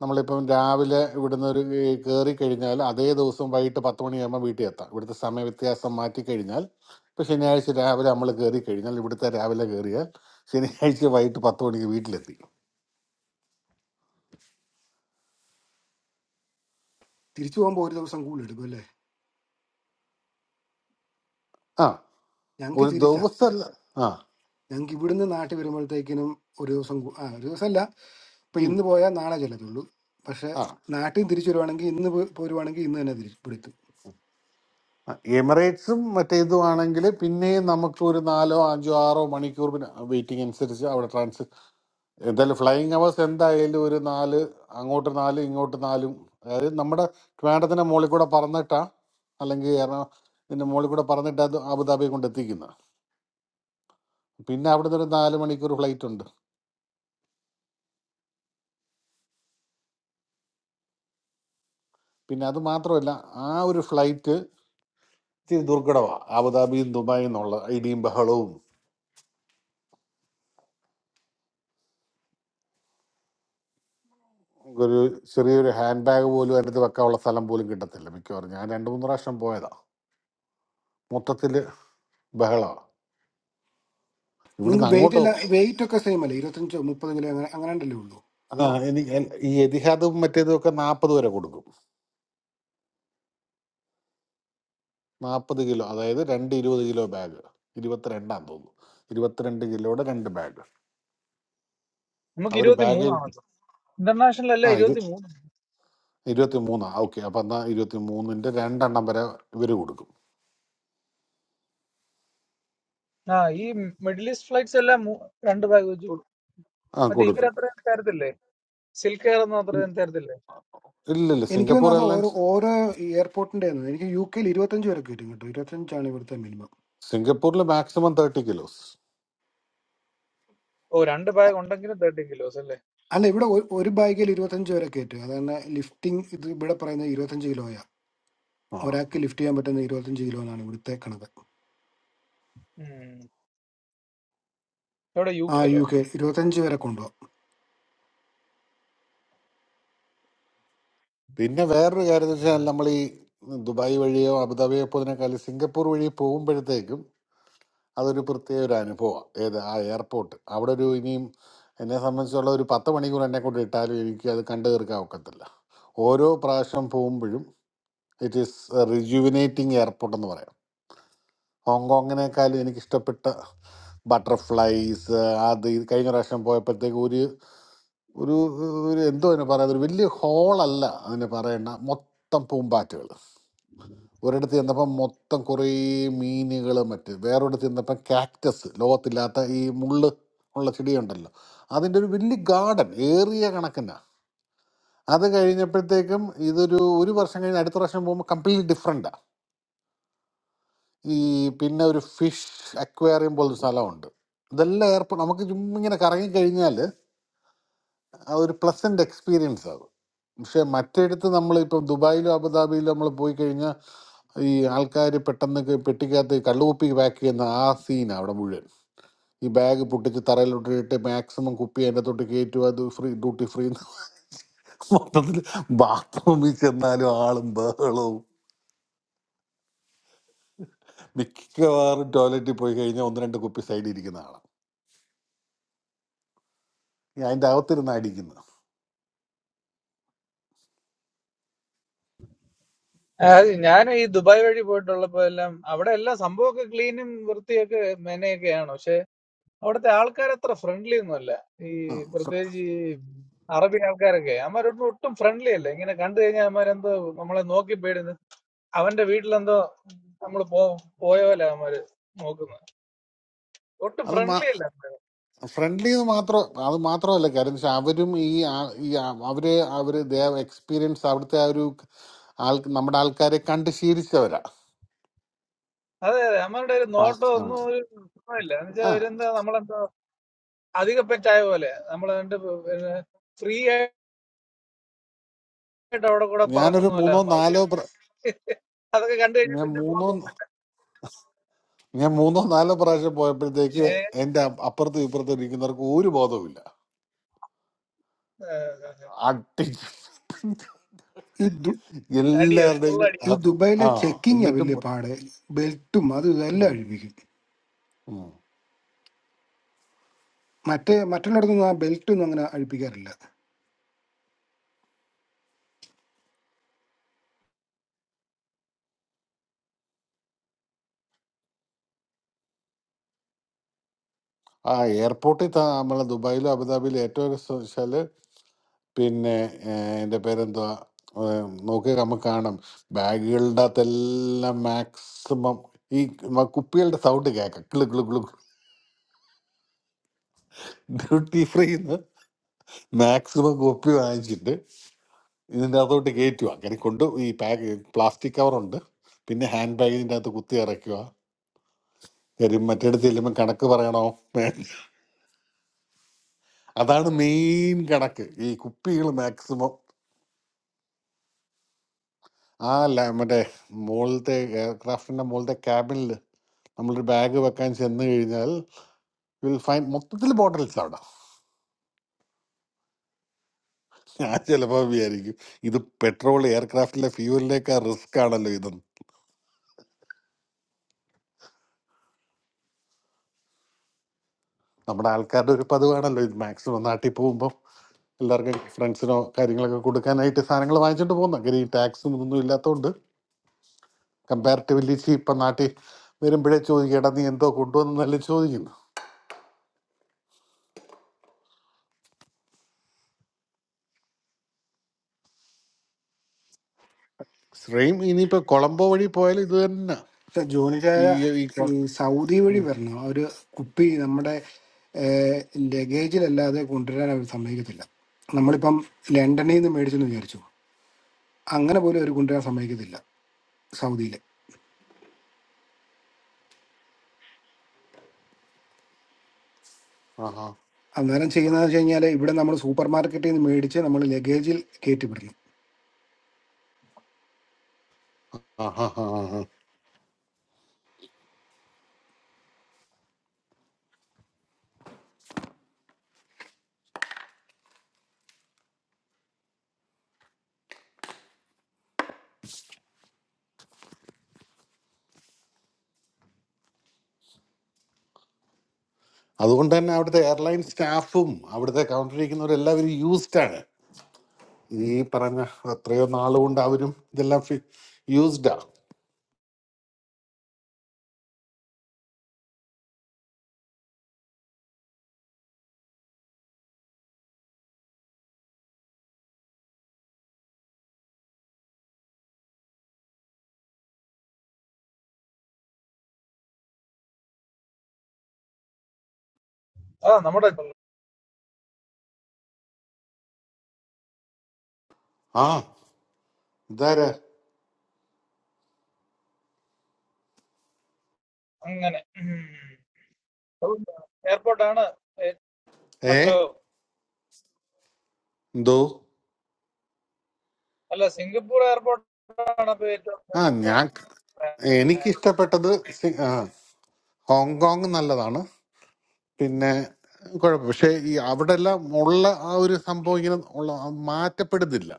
Speaker 11: നമ്മളിപ്പം രാവിലെ ഇവിടുന്ന് ഒരു കയറി കഴിഞ്ഞാൽ അതേ ദിവസം വൈകിട്ട് പത്ത് മണിയാകുമ്പോൾ വീട്ടിൽ എത്താം ഇവിടുത്തെ സമയ വ്യത്യാസം മാറ്റി കഴിഞ്ഞാൽ ഇപ്പം ശനിയാഴ്ച രാവിലെ നമ്മൾ കയറി കഴിഞ്ഞാൽ ഇവിടുത്തെ രാവിലെ കയറിയാൽ ശനിയാഴ്ച വൈകിട്ട് പത്ത് മണിക്ക് വീട്ടിലെത്തി
Speaker 1: തിരിച്ചു പോകുമ്പോൾ ഒരു ദിവസം കൂടി എടുക്കും അല്ലേ
Speaker 11: ആ
Speaker 1: ഞങ്ങൾക്ക്
Speaker 11: ഒരു
Speaker 1: തിരിച്ചാ
Speaker 11: ദിവസമല്ല ആ
Speaker 1: ഞങ്ങൾക്ക് ഇവിടുന്ന് നാട്ടിൽ വരുമ്പോഴത്തേക്കിനും ഒരു ദിവസം കൂ- ആ ഒരു ദിവസം അല്ല ഇപ്പൊ
Speaker 11: ഉം,
Speaker 1: ഇന്ന് പോയാൽ നാളെ ചെല്ലത്തുള്ളൂ പക്ഷെ
Speaker 11: ആ
Speaker 1: നാട്ടിൽ തിരിച്ചു വരുവാണെങ്കിൽ ഇന്ന് പോ- പോരുവാണെങ്കിൽ ഇന്ന് തന്നെ തിരിച്ചു പിടിത്തു
Speaker 11: ആ, എമിറേറ്റ്സും മറ്റേ ഇതും ആണെങ്കിൽ പിന്നെയും നമുക്ക് ഒരു നാലോ അഞ്ചോ ആറോ മണിക്കൂർ പിന്നെ വെയിറ്റിംഗ് അനുസരിച്ച് അവിടെ ട്രാൻസ് എന്തായാലും ഫ്ലൈയിങ് അവേഴ്സ് എന്തായാലും ഒരു നാല് അങ്ങോട്ട് നാല് ഇങ്ങോട്ട് നാലും അതായത് നമ്മുടെ ട്രിവാൻഡത്തിന്റെ മുകളിൽ കൂടെ പറന്നിട്ടാ അല്ലെങ്കിൽ എറണാകുളത്തിന്റെ മുകളിൽ കൂടെ പറന്നിട്ടാ അത് അബുദാബി കൊണ്ട് എത്തിക്കുന്നത് പിന്നെ അവിടുന്ന് ഒരു നാല് മണിക്കൂർ ഫ്ലൈറ്റ് ഉണ്ട് പിന്നെ അത് മാത്രമല്ല ആ ഒരു ഫ്ലൈറ്റ് ഇത്തിരി ദുർഘടമാണ് അബുദാബിയും ദുബായും എന്നുള്ള ഇടിയും ബഹളവും ഒരു ചെറിയൊരു ഹാൻഡ് ബാഗ് പോലും അതിനകത്ത് വെക്കാനുള്ള സ്ഥലം പോലും കിട്ടത്തില്ല മിക്കവാറും ഞാൻ രണ്ട് മൂന്ന് പ്രാവശ്യം പോയതാ മൊത്തത്തിൽ ബഹളമാണ്
Speaker 1: നിങ്ങൾക്ക്
Speaker 11: ഇവിടുന്ന്
Speaker 1: വെയിറ്റ്
Speaker 11: അങ്ങോട്ട്
Speaker 1: അല്ല വെയിറ്റ് ഒക്കെ സെയിം അല്ലേ ഇരുപത്തഞ്ചോ മുപ്പത് കിലോ അങ്ങനെ അങ്ങനെ ഉണ്ടല്ലേ
Speaker 11: ആ
Speaker 1: ഉള്ളൂ
Speaker 11: എനിക്ക് എൻ- ഈ എതിഹാദും മറ്റേതും ഒക്കെ നാൽപ്പത് വരെ കൊടുക്കും നാൽപ്പത് കിലോ അതായത് രണ്ട് ഇരുപത് കിലോ ബാഗ് ഇരുപത്തിരണ്ടാന്ന് തോന്നുന്നു ഇരുപത്തിരണ്ട് കിലോയുടെ രണ്ട് ബാഗ്
Speaker 24: നമുക്ക്
Speaker 11: അവർ
Speaker 24: ഇരുപത്തി
Speaker 11: ബാഗിൽ
Speaker 24: മൂന്നാണല്ലോ ഇന്റർനാഷണൽ അല്ല
Speaker 11: ആ ഇരു
Speaker 24: ഇരുപത്തി മൂന്ന്.
Speaker 11: ഇരുപത്തി മൂന്നാ ഓക്കെ അപ്പം എന്നാൽ ഇരുപത്തി മൂന്നിൻ്റെ രണ്ടെണ്ണം വരെ ഇവർ കൊടുക്കും
Speaker 24: ആ ഈ മിഡിൽ ഈസ്റ്റ് ഫ്ലൈറ്റ്സ് എല്ലാം മൂ- രണ്ട് ബാഗ് വെച്ച് കൊടുക്കും
Speaker 11: ആ
Speaker 24: മറ്റേ
Speaker 11: കൊടുക്കും
Speaker 24: ഇവരത്രയും തരത്തില്ലേ സിൽക്ക് എയർ ഒന്നും
Speaker 11: ഇല്ല
Speaker 24: അത്രയും തരത്തില്ലേ
Speaker 11: ഇല്ല ഇല്ല,
Speaker 1: എനിക്ക്
Speaker 11: സിംഗപ്പൂർ
Speaker 1: തോന്നുന്നു അത് ഓരോ
Speaker 11: എയർലൈൻസ്
Speaker 1: ഓരോ എയർപോർട്ടിന്റെ ആണ് എനിക്ക് യു കെയിൽ ഇരുപത്തഞ്ച് വരെ കയറ്റും കേട്ടോ ഇരുപത്തഞ്ചാണ് ഇവിടുത്തെ മിനിമം
Speaker 11: സിംഗപ്പൂരിൽ മാക്സിമം തേർട്ടി കിലോസ്
Speaker 24: ഓ രണ്ട് ബാഗ് ഉണ്ടെങ്കിലും തേർട്ടി കിലോസ് അല്ലേ
Speaker 1: അല്ല ഇവിടെ ഒ- ഒരു ബാഗിൽ ഇരുപത്തഞ്ച് വരെ കയറ്റും അതാണ് ലിഫ്റ്റിംഗ് ഇത് ഇവിടെ പറയുന്നത് ഇരുപത്തഞ്ച് കിലോയാ
Speaker 11: ആ ആ.
Speaker 1: ഒരാൾക്ക് ലിഫ്റ്റ് ചെയ്യാൻ പറ്റുന്ന ഇരുപത്തഞ്ച് കിലോ എന്നാണ് ഇവിടുത്തെ കണക്ക്
Speaker 24: ഉം. എവിടെ യു
Speaker 1: ആ
Speaker 24: കെയിലോ
Speaker 1: യു കെ ഇരുപത്തഞ്ച് വരെ കൊണ്ടുപോകാം
Speaker 11: പിന്നെ വേറൊരു കാര്യം എന്ന് വെച്ചാൽ നമ്മൾ ഈ ദുബായ് വഴിയോ അബുദാബിയോ പോകുന്നതിനേക്കാൾ സിംഗപ്പൂർ വഴി പോകുമ്പോഴത്തേക്കും അതൊരു പ്രത്യേക ഒരു അനുഭവമാണ് ഏത് ആ എയർപോർട്ട് അവിടെ ഒരു ഇനിയും എന്നെ സംബന്ധിച്ചുള്ള ഒരു പത്ത് മണിക്കൂർ എന്നെ കൊണ്ട് ഇട്ടാലും എനിക്ക് അത് കണ്ടു തീർക്കാൻ ഒക്കത്തില്ല ഓരോ പ്രാവശ്യം പോകുമ്പോഴും ഇറ്റ് ഈസ് റിജുവിനേറ്റിംഗ് എയർപോർട്ട് എന്ന് പറയാം ഹോങ്കോങ്ങിനേക്കാളും എനിക്ക് ഇഷ്ടപ്പെട്ട ബട്ടർഫ്ലൈസ് അത് ഇത് കഴിഞ്ഞ പ്രാവശ്യം പോയപ്പോഴത്തേക്ക് ഒരു ഒരു ഒരു എന്തോ അതിന് പറയാം ഒരു വലിയ ഹോളല്ല അതിന് പറയേണ്ട മൊത്തം പൂമ്പാറ്റകൾ ഒരിടത്ത് ചെന്നപ്പം മൊത്തം കുറേ മീനുകൾ മറ്റ് വേറൊരിടത്ത് ചെന്നപ്പം കാക്ടസ് ലോകത്തില്ലാത്ത ഈ മുള്ള് ഉള്ള ചെടിയുണ്ടല്ലോ അതിൻ്റെ ഒരു വലിയ ഗാർഡൻ ഏറിയ കണക്കിനാ അത് കഴിഞ്ഞപ്പോഴത്തേക്കും ഇതൊരു ഒരു വർഷം കഴിഞ്ഞ് അടുത്ത വർഷം പോകുമ്പോൾ കംപ്ലീറ്റ്ലി ഡിഫറെൻറ്റാണ് ഈ പിന്നെ ഒരു ഫിഷ് അക്വേറിയം പോലൊരു സ്ഥലമുണ്ട് ഇതെല്ലാം ഏർപ്പ് നമുക്ക് ചുമ്മാ ഇങ്ങനെ കറങ്ങി കഴിഞ്ഞാൽ ആ ഒരു പ്ലസന്റ് എക്സ്പീരിയൻസ് ആവും പക്ഷെ മറ്റെടുത്ത് നമ്മൾ ഇപ്പം ദുബായിലോ അബുദാബിയിലോ നമ്മൾ പോയി കഴിഞ്ഞാൽ ഈ ആൾക്കാർ പെട്ടെന്ന് ക- പെട്ടിക്കകത്ത് കള്ളുകുപ്പി പാക്ക് ചെയ്യുന്ന ആ സീനാണ് അവിടെ മുഴുവൻ ഈ ബാഗ് പൊട്ടിച്ച് തറയിലോട്ടിട്ട് മാക്സിമം കുപ്പി അതിൻ്റെ തൊട്ട് കയറ്റുക അത് ഫ്രീ ഡ്യൂട്ടി ഫ്രീ മൊത്തത്തിൽ ബാത്റൂമിൽ ചെന്നാലും ആളും ബഹളവും മിക്കവാറും ടോയ്ലറ്റിൽ പോയി കഴിഞ്ഞാൽ ഒന്ന് രണ്ട് കുപ്പി സൈഡിൽ ഇരിക്കുന്ന ആളാണ് ഈ അതിൻ്റെ അകത്തിരുന്ന് അടിക്കുന്നത്
Speaker 24: ഞാൻ ഈ ദുബായ് വഴി പോയിട്ടുള്ളപ്പോ എല്ലാം അവിടെ എല്ലാം സംഭവമൊക്കെ ക്ലീനും വൃത്തിയൊക്കെ മെനയൊക്കെയാണ് പക്ഷെ അവിടുത്തെ ആൾക്കാർ അത്ര ഫ്രണ്ട്ലി ഒന്നുമല്ല ഈ
Speaker 11: ആ, ഫ്ര-
Speaker 24: പ്രത്യേകിച്ച് ഈ അറബി ആൾക്കാരൊക്കെ അവന്മാരൊന്നും ഒട്ടും ഫ്രണ്ട്ലി അല്ല ഇങ്ങനെ കണ്ടു കഴിഞ്ഞാൽ അവന്മാരെന്തോ നമ്മളെ നോക്കി പേടുന്നു അവന്റെ വീട്ടിലെന്തോ നമ്മൾ പോ പോയ പോലെ അവന്മാര് നോക്കുന്നത് ഒട്ടും
Speaker 11: അത്
Speaker 24: ഫ്രണ്ട്ലി അല്ല
Speaker 11: ഫ്രണ്ട്ലി എന്ന് മാത്രം അത് മാത്രമല്ല കാര്യം പക്ഷെ അവരും ഈ ആ- ഈ ആ- അവര് അവര് ദേ എക്സ്പീരിയൻസ് അവിടുത്തെ ആ ഒരു ആൾ നമ്മുടെ ആൾക്കാരെ കണ്ട് ശീലിച്ചവരാ
Speaker 24: അതെ അതെ നമ്മളുടെ ഒരു
Speaker 11: അപ്പൊ
Speaker 24: നോട്ടം
Speaker 11: ആ
Speaker 24: ഒന്നും ഒരു സുഖമില്ല എന്നുവെച്ചാൽ
Speaker 11: ആ.
Speaker 24: അവരെന്താ നമ്മളെന്താ അധിക പെറ്റായ പോലെ നമ്മളെ കണ്ട് ഫ്രീ ആയിട്ട് അവിടെ കൂടെ
Speaker 11: ഞാനൊരു
Speaker 24: പറക്കുന്ന പോലെ
Speaker 11: മൂന്നോ
Speaker 24: അവന്മാർക്ക്
Speaker 11: നാലോ പ്ര-
Speaker 24: അതൊക്കെ കണ്ടു കഴിഞ്ഞാൽ
Speaker 11: ഞാൻ
Speaker 24: പിന്നെ പോകാൻ
Speaker 11: മൂന്നോ
Speaker 24: തോന്നും.
Speaker 11: ഞാൻ മൂന്നോ നാലോ പ്രാവശ്യം പോയപ്പോഴത്തേക്ക്
Speaker 24: ഏ,
Speaker 11: എന്റെ അപ്പ- അപ്പുറത്തും ഇപ്പുറത്തും ഇരിക്കുന്നവർക്ക് ഒരു ബോധവുമില്ല അട്ടി
Speaker 1: ഈ ദു-
Speaker 24: അടിയോ ഫുൾ
Speaker 11: എല്ലാവരുടെയും ആ
Speaker 1: ഈ
Speaker 24: അടിയോ
Speaker 11: ആ,
Speaker 1: ദുബായിലെ ചെക്കിങ്
Speaker 11: എന്നിട്ടും
Speaker 1: വലിയ പാട് ബെൽറ്റും അത് ഇതെല്ലാം
Speaker 11: ഉം,
Speaker 1: അഴിപ്പിക്കും
Speaker 11: ഉം.
Speaker 1: മറ്റേ മറ്റുള്ളിടത്തൊന്നും ആ ബെൽറ്റൊന്നും അങ്ങനെ അഴിപ്പിക്കാറില്ല
Speaker 11: ആ എയർപോർട്ടിൽ നമ്മളെ ദുബായിലും അബുദാബിയിലും ഏറ്റവും രസം വെച്ചാല് പിന്നെ എൻ്റെ പേരെന്തുവാ ഏഹ് നോക്കി നമുക്ക് കാണാം ബാഗുകളുടെ അകത്തെല്ലാം മാക്സിമം ഈ മ- കുപ്പികളുടെ സൗണ്ട് കേൾക്കാം കിളു കിളു കിളു ഡ്യൂട്ടി ഫ്രീന്ന് മാക്സിമം കുപ്പി വാങ്ങിച്ചിട്ട് ഇതിൻ്റെ അകത്തോട്ട് കയറ്റുക അങ്ങനെ കൊണ്ട് ഈ പാക്ക് പ്ലാസ്റ്റിക് കവറുണ്ട് പിന്നെ ഹാൻഡ് ബാഗിൻ്റെ അകത്ത് കുത്തി ഇറക്കുക കാര്യം മറ്റേടത്ത് ചെല്ലുമ്പോൾ കണക്ക് പറയണോ അതാണ് മെയിൻ കണക്ക് ഈ കുപ്പികൾ മാക്സിമം ആ ല- മറ്റേ മുകളിലത്തെ എയർക്രാഫ്റ്റിൻ്റെ മുകളിലത്തെ ക്യാബിനിൽ നമ്മളൊരു ബാഗ് വെക്കാൻ ചെന്ന് കഴിഞ്ഞാൽ വിൽ ഫൈൻഡ് മൊത്തത്തിൽ ബോട്ടിൽസ് അവിടെ ഞാൻ ചിലപ്പോൾ വിചാരിക്കും ഇത് പെട്രോൾ എയർക്രാഫ്റ്റിലെ ഫ്യൂവലിനേക്കാൾ റിസ്ക് ആണല്ലോ ഇതെന്ന് നമ്മുടെ ആൾക്കാരുടെ ഒരു പതിവാണല്ലോ ഇത് മാക്സിമം നാട്ടിൽ പോകുമ്പോൾ എല്ലാവർക്കും ഫ്രണ്ട്സിനോ കാര്യങ്ങളൊക്കെ കൊടുക്കാനായിട്ട് സാധനങ്ങൾ വാങ്ങിച്ചിട്ട് പോകുന്ന കാര്യം ഈ ടാക്സും ഇതൊന്നും ഇല്ലാത്തതുകൊണ്ട് കമ്പാരിറ്റീവ്ലി ഇപ്പം നാട്ടിൽ വരുമ്പോഴേ ചോദിക്കും എടാ നീ എന്തോ കൊണ്ടുവന്നല്ലേ ചോദിക്കുന്നു സെയിം ഇനിയിപ്പോൾ കൊളംബോ വഴി പോയാലും ഇത് തന്നെ
Speaker 1: പക്ഷെ ജോണിച്ചായ
Speaker 11: ഈ ഈ കൊ-
Speaker 1: ഈ സൗദി വഴി
Speaker 11: ഉം.
Speaker 1: വരണം ആ ഒരു കുപ്പി നമ്മുടെ ലഗേജിലല്ലാതെ കൊണ്ടുവരാൻ അവർ സമ്മതിക്കത്തില്ല നമ്മളിപ്പം ലണ്ടനിൽ നിന്ന് മേടിച്ചെന്ന് വിചാരിച്ചു അങ്ങനെ പോലും അവർ കൊണ്ടുവരാൻ സമ്മതിക്കത്തില്ല സൗദിയിൽ
Speaker 11: ആഹാ
Speaker 1: അന്നേരം ചെയ്യുന്നതെന്ന് വെച്ച് കഴിഞ്ഞാൽ ഇവിടെ നമ്മൾ സൂപ്പർ മാർക്കറ്റിൽ നിന്ന് മേടിച്ച് നമ്മൾ ലഗേജിൽ കയറ്റി വിടണം
Speaker 11: ആഹാ ആഹാ അതുകൊണ്ട് തന്നെ അവിടുത്തെ എയർലൈൻ സ്റ്റാഫും അവിടുത്തെ കൗണ്ടറിയിരിക്കുന്നവരും എല്ലാവരും യൂസ്ഡ് ആണ് ഈ പറഞ്ഞ എത്രയോ നാളുകൊണ്ട് അവരും ഇതെല്ലാം യൂസ്ഡാ
Speaker 24: ആ നമ്മുടെ
Speaker 11: ആ ഇതാരാ
Speaker 24: അങ്ങനെ എയർപോർട്ടാണ്
Speaker 11: ഏ
Speaker 24: ഹലോ
Speaker 11: എന്തോ
Speaker 24: അല്ല സിംഗപ്പൂർ എയർപോർട്ടാണ് ഇപ്പൊ ഏറ്റവും
Speaker 11: ആ ഞാൻ
Speaker 24: ഉം.
Speaker 11: എനിക്ക് ഇഷ്ടപ്പെട്ടത് സി- ആ, ഹോങ്കോങ് നല്ലതാണ് പിന്നെ കുഴപ്പം പക്ഷേ ഈ അവിടെ എല്ലാം ഉള്ള ആ ഒരു സംഭവം ഇങ്ങനെ ഉള്ള മാറ്റപ്പെടുന്നില്ല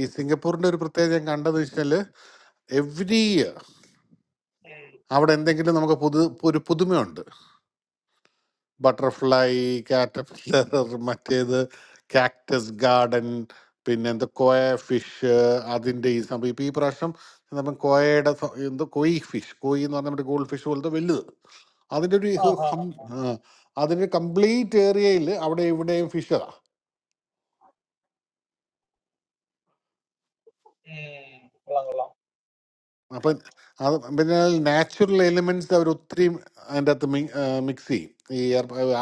Speaker 11: ഈ സിംഗപ്പൂരിന്റെ ഒരു പ്രത്യേകത ഞാൻ കണ്ടത് വെച്ചാല് എവ്രി ഇയർ അവിടെ എന്തെങ്കിലും നമുക്ക് പുതു ഒരു പുതുമയുണ്ട് ബട്ടർഫ്ലൈ കാറ്റർപില്ലർ മറ്റേത് കാക്ടസ് ഗാർഡൻ പിന്നെ എന്താ കോയ ഫിഷ് അതിൻ്റെ ഈ സംഭവം ഇപ്പോൾ ഈ പ്രാവശ്യം നമ്മൾ കോയയുടെ സ- എന്തോ കൊയ് ഫിഷ് കൊയ് എന്ന് പറഞ്ഞാൽ നമ്മുടെ ഗോൾഡ് ഫിഷ് പോലത്തെ വലുത് അതിൻ്റെ ഒരു
Speaker 24: ആ,
Speaker 11: ഹു-
Speaker 24: ആ, ആ.
Speaker 11: ഹം- ആ, അതിൻ്റെ കംപ്ലീറ്റ് ഏരിയയിൽ അവിടെ ഇവിടെയും ഫിഷ്
Speaker 24: ഉം. കൊള്ളാം കൊള്ളാം
Speaker 11: അപ്പം അത് പിന്നെ നാച്ചുറൽ എലിമെന്റ്സ് അവർ ഒത്തിരി അതിൻ്റെ അകത്ത് മിക്സ് ചെയ്യും ഈ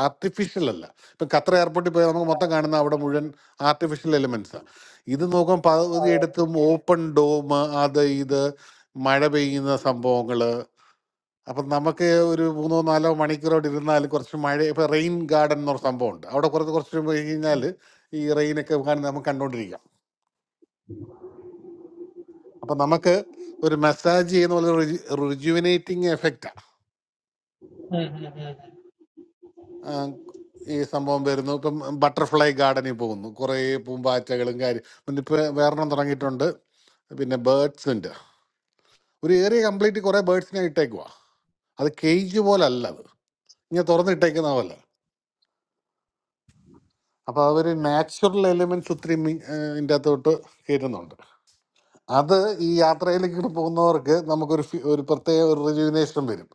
Speaker 11: ആർട്ടിഫിഷ്യൽ അല്ല ഇപ്പം ഖത്തർ എയർപോർട്ടിൽ പോയാൽ നമുക്ക് മൊത്തം കാണുന്ന അവിടെ മുഴുവൻ ആർട്ടിഫിഷ്യൽ എലിമെന്റ്സാണ് ഇത് നോക്കാൻ പകുതി എടുത്തും ഓപ്പൺ ഡോം അത് ഇത് മഴ പെയ്യുന്ന സംഭവങ്ങൾ അപ്പം നമുക്ക് ഒരു മൂന്നോ നാലോ മണിക്കൂറോടെ ഇരുന്നാൽ കുറച്ച് മഴ ഇപ്പം റെയിൻ ഗാർഡൻ എന്ന് പറഞ്ഞ സംഭവമുണ്ട് അവിടെ കുറച്ച് കുറച്ച് പോയി കഴിഞ്ഞാൽ ഈ റെയിനൊക്കെ കാണുന്ന നമുക്ക് കണ്ടുകൊണ്ടിരിക്കാം അപ്പം നമുക്ക് ഒരു മസാജ് ചെയ്യുന്ന പോലെ റിജുവിനേറ്റിംഗ് എഫക്റ്റാണ് ആ, ഈ സംഭവം വരുന്നു ഇപ്പം ബട്ടർഫ്ലൈ ഗാർഡനിൽ പോകുന്നു കുറേ പൂമ്പാറ്റകളും കാര്യം പിന്നെ ഇപ്പം വേറെണ്ണം തുടങ്ങിയിട്ടുണ്ട് പിന്നെ ബേർഡ്സിൻ്റെ ഒരു ഏരിയ കംപ്ലീറ്റ് കുറേ ബേർഡ്സിനെ ഇട്ടേക്കുവാ അത് കേജ് പോലെ അല്ല അത് ഇങ്ങനെ തുറന്നിട്ടേക്കുന്ന പോലെ അപ്പോൾ അവർ നാച്ചുറൽ എലിമെൻറ്റ്സ് ഒത്തിരി മി- ഏ, ഇതിൻ്റെ അകത്തോട്ട് കയറ്റുന്നുണ്ട് അത് ഈ യാത്രയിലേക്ക് ഇങ്ങോട്ട് പോകുന്നവർക്ക് നമുക്കൊരു ഫി- ഒരു പ്രത്യേക ഒരു റിജുവിനേഷൻ വരും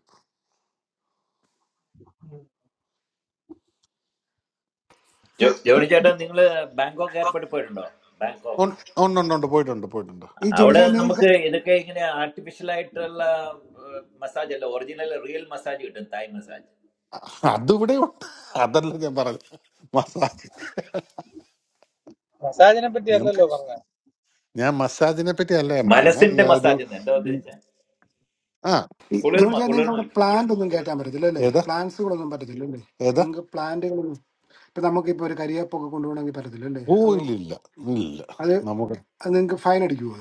Speaker 21: ജോ- ജോണി ചേട്ടാ നിങ്ങൾ ബാങ്കോക്ക് എയർപോർട്ടിൽ പോയിട്ടുണ്ടോ ബാങ്കോക്ക്
Speaker 11: ഉൺ- ഉണ്ട് ഉണ്ട് ഉണ്ട് പോയിട്ടുണ്ട് പോയിട്ടുണ്ട്
Speaker 1: ഈ
Speaker 21: അവിടെ
Speaker 1: ജോണിച്ചായ നിങ്ങൾക്ക്
Speaker 21: നമുക്ക് ഇതൊക്കെ ഇങ്ങനെ ആർട്ടിഫിഷ്യൽ ആയിട്ടുള്ള മസാജ് അല്ല ഒറിജിനൽ റിയൽ മസാജ് കിട്ടും തായ് മസാജ്
Speaker 11: അതിവിടെ ഉണ്ട് അതല്ല ഞാൻ പറഞ്ഞു മസാജ്
Speaker 24: മസാജിനെ പറ്റി അല്ലല്ലോ
Speaker 11: ഞാൻ മസാജിനെ പറ്റി അല്ല ഞാൻ പറഞ്ഞ ഈ
Speaker 21: മനസ്സിന്റെ
Speaker 11: ആ ഒരു
Speaker 21: മസാജ് എന്ന് എന്താ
Speaker 11: ഉം.
Speaker 21: ഉദ്ദേശിച്ചത്
Speaker 11: ആ
Speaker 1: ഈ
Speaker 21: കുളിർമ
Speaker 1: ജോണിച്ചായ നിങ്ങൾക്ക്
Speaker 21: കുളിർമ
Speaker 1: അവിടെ
Speaker 21: കിട്ടും
Speaker 1: പ്ലാന്റ് ഒന്നും കയറ്റാൻ പറ്റത്തില്ല അല്ലേ
Speaker 11: ഏതാ
Speaker 1: പ്ലാന്റ്സുകളൊന്നും പറ്റത്തില്ല അല്ലേ
Speaker 11: ഏതാ
Speaker 1: നിങ്ങൾക്ക് പ്ലാന്റുകളൊന്നും ഇപ്പം നമുക്കിപ്പോൾ ഒരു കരിയേപ്പൊക്കെ കൊണ്ടുപോകണമെങ്കിൽ പറ്റത്തില്ല അല്ലേ
Speaker 11: ഓ
Speaker 1: അത്
Speaker 11: ഇല്ല ഇല്ല ഇല്ല
Speaker 1: അത്
Speaker 11: നമുക്ക്
Speaker 1: അത് നിങ്ങൾക്ക് ഫൈൻ അടിക്കുമോ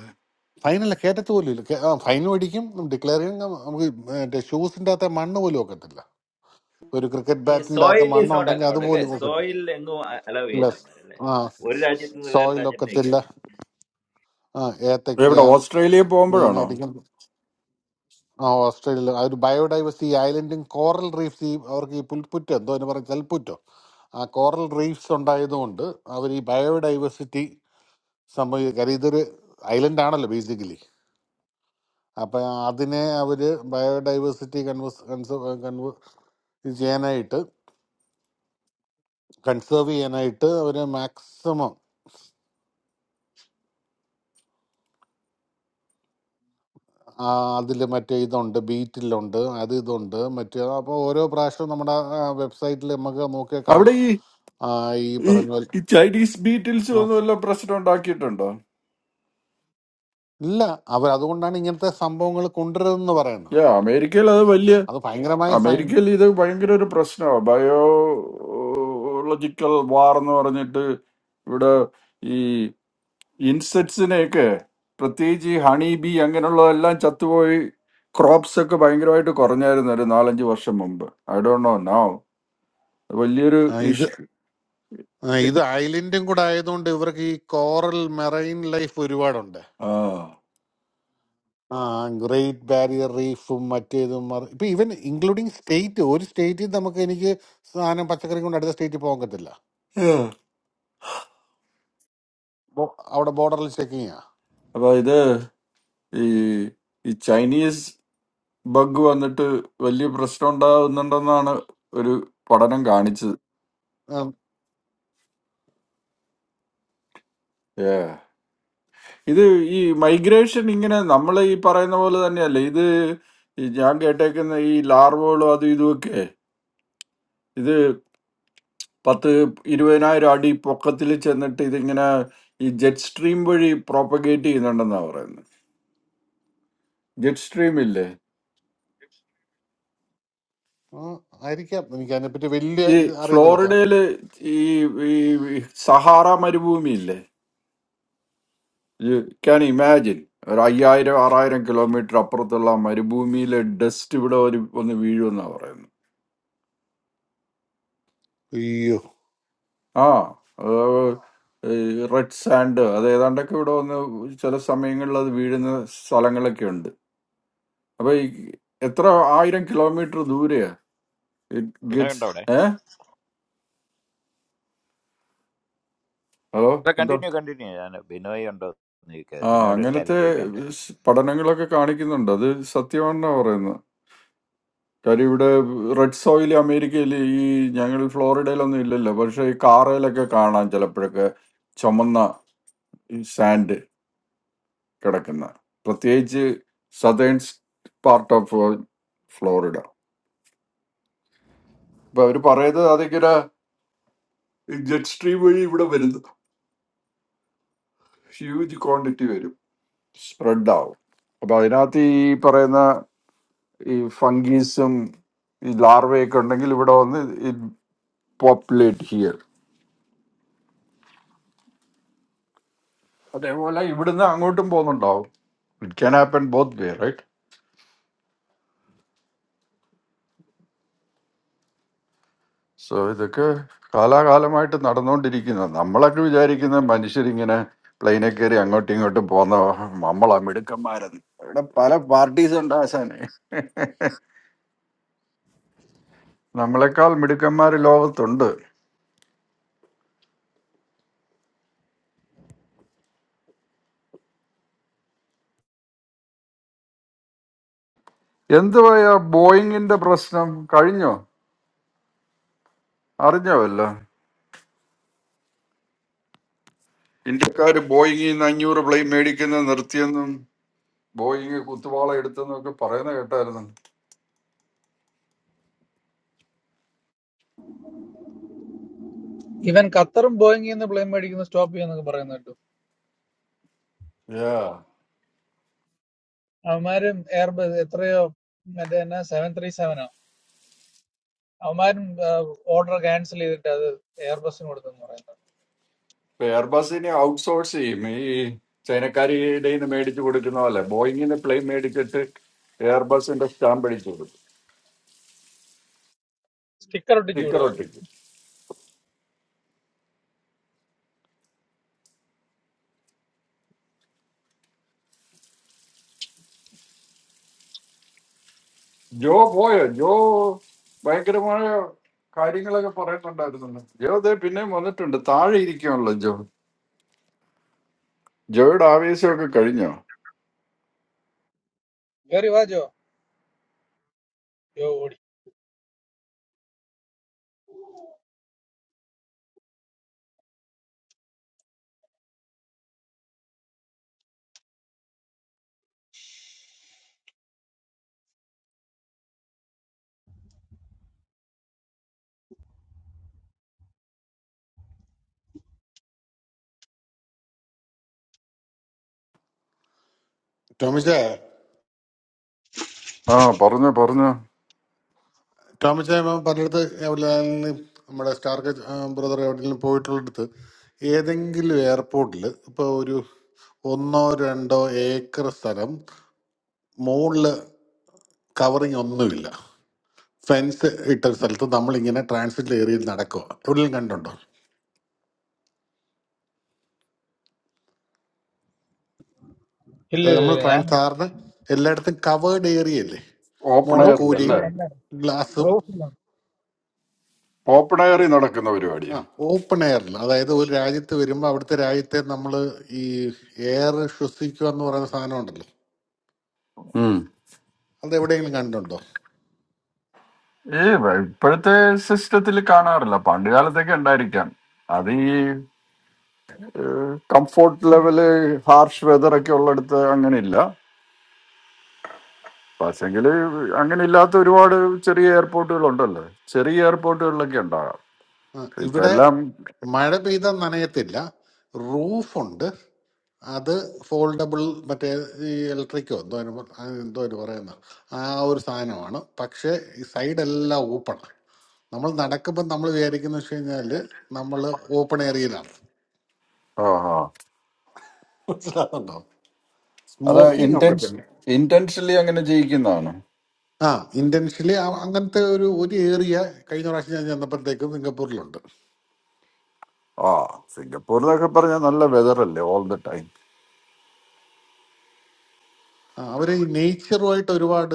Speaker 11: ഫൈനല്ല കേട്ടത് പോലും ഇല്ല കേ- ആ, ഫൈൻ മേടിക്കും ഡിക്ലെയർ ചെയ്യും നമ്മ- നമുക്ക് മറ്റേ ഷൂസിന്റെ അകത്തെ മണ്ണ് പോലും ഒക്കത്തില്ല ഒരു ക്രിക്കറ്റ്
Speaker 21: ഈ
Speaker 11: ബാറ്റിന്റെ അകത്ത്
Speaker 21: സോയിൽ ഈസ്
Speaker 11: മണ്ണ്
Speaker 21: നോട്ട്
Speaker 11: ഉണ്ടെങ്കിൽ
Speaker 21: അലൗഡ് അല്ലേ
Speaker 11: അതുപോലും ഒക്കത്തില്ല
Speaker 21: സോയിൽ എങ്ങും അലൗ
Speaker 11: ഇല്ല
Speaker 21: ചെയ്യില്ല അവന്മാര്, അല്ലേ
Speaker 11: ആ
Speaker 21: ഒരു രാജ്യത്ത് നിന്ന് വേറെ
Speaker 11: സോയിൽ
Speaker 21: രാജ്യത്തേക്ക്
Speaker 11: ഒക്കത്തില്ല ആ ഏത്തക്ക
Speaker 14: എവിടെ ഓസ്ട്രേലിയ പോകുമ്പോഴാണോ
Speaker 11: മെയിനായിട്ട് ഇങ്ങനെ- ആ ഓസ്ട്രേലിയ ആ ഒരു ബയോഡൈവേഴ്സിറ്റി ഐലൻഡും കോറൽ റീഫ്സ് അവർക്ക് ഈ പുൽപ്പുറ്റോ എന്തോ അതിന് പറയും കൽപ്പുറ്റോ ആ കോറൽ റീഫ്സ് ഉണ്ടായതുകൊണ്ട് അവർ ഈ ബയോഡൈവേഴ്സിറ്റി സംഭവിക്കുക കാര്യം ഇതൊരു ഐലൻഡ് ആണല്ലോ ബേസിക്കലി അപ്പം അതിനെ അവർ ബയോഡൈവേഴ്സിറ്റി കൺവേഴ്സ് കൺസേർവ് കൺവേ ഇത് ചെയ്യാനായിട്ട് കൺസേർവ് ചെയ്യാനായിട്ട് അവർ മാക്സിമം അതിൽ മറ്റേ ഇതുണ്ട് ബീറ്റിലുണ്ട് അത് ഇതുണ്ട് മറ്റേ അപ്പോൾ ഓരോ പ്രാവശ്യവും നമ്മുടെ വെബ്സൈറ്റിൽ നമുക്ക് നോക്കിയാൽ
Speaker 14: അവിടെ
Speaker 11: കാണാം
Speaker 14: ഈ
Speaker 11: ആ, ഈ
Speaker 14: ഈ
Speaker 11: പറഞ്ഞ പോലെ
Speaker 14: ഈ ചൈനീസ് ബീറ്റിൽസ്
Speaker 11: ആ.
Speaker 14: ഒന്നും വല്ല പ്രശ്നം ഉണ്ടാക്കിയിട്ടുണ്ടോ
Speaker 11: ഇല്ല അവർ അതുകൊണ്ടാണ് ഇങ്ങനത്തെ സംഭവങ്ങൾ കൊണ്ടുവരുന്നത് പറയുന്നത്
Speaker 14: ഏ അമേരിക്കയിൽ അത് വലിയ
Speaker 11: അത് ഭയങ്കരമായ ഫൈൻ
Speaker 14: അമേരിക്കയിൽ ഇത് ഭയങ്കര ഒരു പ്രശ്നമാണ് ബയോളജിക്കൽ വാർ എന്ന് പറഞ്ഞിട്ട് ഇവിടെ ഈ ഇൻസെക്ട്സിനെയൊക്കെ പ്രത്യേകിച്ച് ഈ ഹണി ബി അങ്ങനെയുള്ളതെല്ലാം ചത്തുപോയി ക്രോപ്സ് ഒക്കെ ഭയങ്കരമായിട്ട് കുറഞ്ഞായിരുന്നു ഒരു നാലഞ്ച് വർഷം മുമ്പ് ഐ ഡോ നോ നോ വലിയൊരു
Speaker 11: ഇത്
Speaker 14: ഇഷ്യൂ
Speaker 11: ആ, ഇത് ഐലൻഡും കൂടെ ആയതുകൊണ്ട് ഇവർക്ക് ഈ കോറൽ മെറൈൻ ലൈഫ് ഒരുപാടുണ്ട്
Speaker 14: ആ
Speaker 11: ആ ഗ്രേറ്റ് ബാരിയർ റീഫും മറ്റേതും മറി- ഇപ്പൊ ഇവൻ ഇൻക്ലൂഡിങ് സ്റ്റേറ്റ് ഒരു സ്റ്റേറ്റിൽ നമുക്ക് എനിക്ക് സാധനം പച്ചക്കറി കൊണ്ട് അടുത്ത സ്റ്റേറ്റിൽ പോകാൻ പറ്റില്ല ബോ- അവിടെ ബോർഡറിൽ ചെക്കിങ്ങാ
Speaker 14: അപ്പൊ ഇത് ഈ ഈ ചൈനീസ് ബഗ് വന്നിട്ട് വലിയ പ്രശ്നം ഉണ്ടാകുന്നുണ്ടെന്നാണ് ഒരു പഠനം കാണിച്ചത്
Speaker 11: ആ,
Speaker 14: ഇത് ഈ ജെ- ഇത് പത്ത ഈ ജെ- ജെ-
Speaker 11: ആ, ആയിരിക്കാം എനിക്ക് അതിനെപ്പറ്റി വലിയ ഇത് അറിയത്തില്ല ചാ
Speaker 14: ഇതില് ഈ ഈ ഈ സഹാറ മരുഭൂമി ഇല്ലേ ക്യാൻ ഇമാജിൻ ഒരു അയ്യായിരം ആറായിരം കിലോമീറ്റർ അപ്പുറത്തുള്ള മരുഭൂമിയിലെ ഡസ്റ്റ് ഇവിടെ ഒരു ഒന്ന് വീഴുമെന്നാ പറയുന്നത്
Speaker 11: അയ്യോ
Speaker 14: ആ റെഡ് സാൻഡ് അത് ഏതാണ്ടൊക്കെ ഇവിടെ വന്ന് ചില സമയങ്ങളിൽ അത് വീഴുന്ന സ്ഥലങ്ങളൊക്കെ ഉണ്ട് അപ്പൊ ഈ എത്ര ആയിരം കിലോമീറ്റർ ദൂരെയാ ഇറ്റ്
Speaker 21: ബിനോയ്
Speaker 14: ഗെറ്റ്സ്
Speaker 21: ഉണ്ടോ അവിടെ
Speaker 14: ഏ ഹലോ എന്തോ
Speaker 21: കണ്ടിന്യൂ കണ്ടിന്യൂ ഞാൻ ബിനോയ് ഉണ്ടോ എന്ന് ചോദിക്കാം.
Speaker 14: ആ
Speaker 21: ബിനോയോട് ഒരു കാര്യം
Speaker 14: അങ്ങനത്തെ
Speaker 21: ചോദിക്കണ്ടേ
Speaker 14: സ് പഠനങ്ങളൊക്കെ കാണിക്കുന്നുണ്ട് അത് സത്യമാണെന്നാ പറയുന്നത് കാര്യം ഇവിടെ റെഡ് സോയിൽ അമേരിക്കയിൽ ഈ ഞങ്ങൾ ഫ്ലോറിഡയിലൊന്നും ഇല്ലല്ലോ പക്ഷെ ഈ കാറയിലൊക്കെ കാണാം ചിലപ്പോഴൊക്കെ ചുമന്ന സാൻഡ് കിടക്കുന്ന പ്രത്യേകിച്ച് സതേൺ പാർട്ട് ഓഫ് ഫ്ലോറിഡ അപ്പൊ അവർ പറയുന്നത് അതിങ്ങനെ ജെറ്റ് സ്ട്രീം വഴി ഇവിടെ വരുന്നു ഹ്യൂജ് ക്വാണ്ടിറ്റി വരും സ്പ്രെഡ് ആവും അപ്പൊ അതിനകത്ത് ഈ പറയുന്ന ഈ ഫംഗീസും ഈ ലാർവയൊക്കെ ഉണ്ടെങ്കിൽ ഇവിടെ വന്ന് ഇറ്റ് പോപ്പുലേറ്റ് ഹിയർ അതേപോലെ ഇവിടുന്ന് അങ്ങോട്ടും പോകുന്നുണ്ടാവും it can happen both way right so ഇതൊക്കെ കാലാകാലമായിട്ട് നടന്നുകൊണ്ടിരിക്കുന്നത് നമ്മളൊക്കെ വിചാരിക്കുന്ന മനുഷ്യരിങ്ങനെ പ്ലെയിനിൽ കയറി അങ്ങോട്ടും ഇങ്ങോട്ടും പോകുന്ന നമ്മളാ മിടുക്കന്മാരെന്ന് ഇവിടെ പല പാർട്ടീസ് ഉണ്ട് ആശാനെ നമ്മളെക്കാൾ മിടുക്കന്മാർ ലോകത്തുണ്ട് എന്തുവായ ബോയിങ്ങിന്റെ പ്രശ്നം കഴിഞ്ഞോ അറിഞ്ഞോ വല്ല ഇന്ത്യക്കാർ ബോയിങ്ങിൽ നിന്ന് അഞ്ഞൂറ് പ്ലെയിൻ മേടിക്കുന്നത് നിർത്തിയെന്നും ബോയിങ് കുത്തുവാള എടുത്തെന്നും ഒക്കെ പറയുന്ന കേട്ടായിരുന്നു
Speaker 24: ഇവൻ ഖത്തറും ബോയിങ്ങിൽ നിന്ന് പ്ലെയിൻ മേടിക്കുന്ന സ്റ്റോപ്പ് ചെയ്യുന്നൊക്കെ പറയുന്ന കേട്ടു
Speaker 14: Yeah.
Speaker 24: അവന്മാരും എയർബസ് എത്രയോ മറ്റേ എന്നാ സെവൻ ത്രീ സെവനോ അവന്മാരും ഓർഡർ ക്യാൻസൽ ചെയ്തിട്ട് അത് എയർബസിന് കൊടുത്തെന്ന് പറയുന്നത്
Speaker 14: ഇപ്പൊ എയർബസിനെ ഔട്ട്സോഴ്സ് ചെയ്യും ഈ ചൈനക്കാരുടെ നിന്ന് മേടിച്ചു കൊടുക്കുന്ന പോലെ ബോയിങ്ങിന് പ്ലെയിൻ മേടിച്ചിട്ട് എയർബസിന്റെ സ്റ്റാമ്പ് അടിച്ചു കൊടുക്കും
Speaker 24: സ്റ്റിക്കർ ഒട്ടിച്ചു
Speaker 14: സ്റ്റിക്കർ
Speaker 24: വിടുക അവര്
Speaker 14: ഒട്ടിച്ച് ജോ പോയോ ജോ ഭയങ്കരമായ കാര്യങ്ങളൊക്കെ പറയുന്നുണ്ടായിരുന്നു ജോ ദേ പിന്നെയും വന്നിട്ടുണ്ട് താഴെ ഇരിക്കുമല്ലോ ജോ ജോയുടെ ആവേശമൊക്കെ കഴിഞ്ഞോ
Speaker 24: കയറി വാജോ യോ ഓടി
Speaker 11: ടോമിച്ച
Speaker 14: ആ പറഞ്ഞോ പറഞ്ഞോ
Speaker 11: ടോമിച്ചായ പലയിടത്ത് എവിടെയാണ് നമ്മുടെ സ്റ്റാർ ബ്രദർ എവിടെയെങ്കിലും പോയിട്ടുള്ളിടത്ത് ഏതെങ്കിലും എയർപോർട്ടിൽ ഇപ്പോൾ ഒരു ഒന്നോ രണ്ടോ ഏക്കർ സ്ഥലം മുകളിൽ കവറിങ് ഒന്നുമില്ല ഫെൻസ് ഇട്ട ഒരു സ്ഥലത്ത് നമ്മളിങ്ങനെ ട്രാൻസിറ്റ് ഏരിയയിൽ നടക്കുക എവിടെയെങ്കിലും കണ്ടുണ്ടോ
Speaker 24: ഇല്ല
Speaker 11: അത്
Speaker 24: ഇല്ല
Speaker 11: നമ്മൾ
Speaker 24: ഇല്ല, ഞാൻ
Speaker 11: ട്രാൻസ് സാറിന് എല്ലായിടത്തും കവേർഡ് ഏരിയ അല്ലേ
Speaker 14: ഓപ്പൺ
Speaker 11: മുകളിൽ
Speaker 14: എയറിൽ
Speaker 11: കൂരയും
Speaker 14: അല്ലേ
Speaker 24: റൂഫില്ല
Speaker 11: ഗ്ലാസും
Speaker 24: റൂഫില്ല
Speaker 14: ഓപ്പൺ എയറിൽ നടക്കുന്ന
Speaker 11: ആ
Speaker 14: പരിപാടിയാ
Speaker 11: ഓപ്പൺ എയറിൽ അതായത് ഒരു രാജ്യത്ത് വരുമ്പോൾ അവിടുത്തെ രാജ്യത്തെ നമ്മൾ ഈ എയർ ശ്വസിക്കുക എന്ന് പറയുന്ന സാധനം ഉണ്ടല്ലോ
Speaker 14: ഉം.
Speaker 11: അത് എവിടെയെങ്കിലും കണ്ടുണ്ടോ
Speaker 14: ഈ വ- ഇപ്പോഴത്തെ സിസ്റ്റത്തിൽ കാണാറില്ല പണ്ട് കാലത്തൊക്കെ ഉണ്ടായിരിക്കാം അത് ഈ കംഫോർട്ട് ലെവല് ഹാർഷ് വെതർ ഒക്കെ ഉള്ളിടത്ത് അങ്ങനെ ഇല്ല പക്ഷെങ്കിൽ അങ്ങനെ ഇല്ലാത്ത ഒരുപാട് ചെറിയ എയർപോർട്ടുകൾ ഉണ്ടല്ലോ ചെറിയ എയർപോർട്ടുകളിലൊക്കെ ഉണ്ടാകാം
Speaker 11: ആ,
Speaker 14: ഇപ്പൊ
Speaker 11: ഇവിടെ
Speaker 14: എല്ലാം
Speaker 11: മഴ പെയ്ത നനയത്തില്ല റൂഫുണ്ട് അത് ഫോൾഡബിൾ മറ്റേ ഈ ഇലക്ട്രിക്കോ എന്തോ അതിന് പറ- ആ എന്തോ ഒരു പറയുന്ന ആ ഒരു സാധനമാണ് പക്ഷേ ഈ സൈഡെല്ലാം ഓപ്പണാണ് നമ്മൾ നടക്കുമ്പോൾ നമ്മൾ വിചാരിക്കുന്ന വെച്ച് കഴിഞ്ഞാൽ നമ്മൾ ഓപ്പൺ ഏരിയയിലാണ്
Speaker 14: ആ ആ
Speaker 11: മനസ്സിലാകുന്നുണ്ടോ
Speaker 14: അത്
Speaker 11: സ്മോക്കിംഗ് ഒക്കെ
Speaker 14: ഇന്റൻസ്
Speaker 11: തന്നെ
Speaker 14: ഇന്റൻഷലി അങ്ങനെ ജയിക്കുന്നതാണ്
Speaker 11: ആ ഇന്റൻഷ്യലി അങ്ങനത്തെ ഒരു ഒരു ഏരിയ കഴിഞ്ഞ പ്രാവശ്യം ഞാൻ ചെന്നപ്പോഴത്തേക്കും സിംഗപ്പൂരിലുണ്ട്
Speaker 14: ആ സിംഗപ്പൂർ എന്നൊക്കെ പറഞ്ഞാൽ നല്ല വെതർ അല്ലേ ഓൾ ദ ടൈം
Speaker 11: ആ, അവര് ഈ നേച്ചറുമായിട്ട് ഒരുപാട്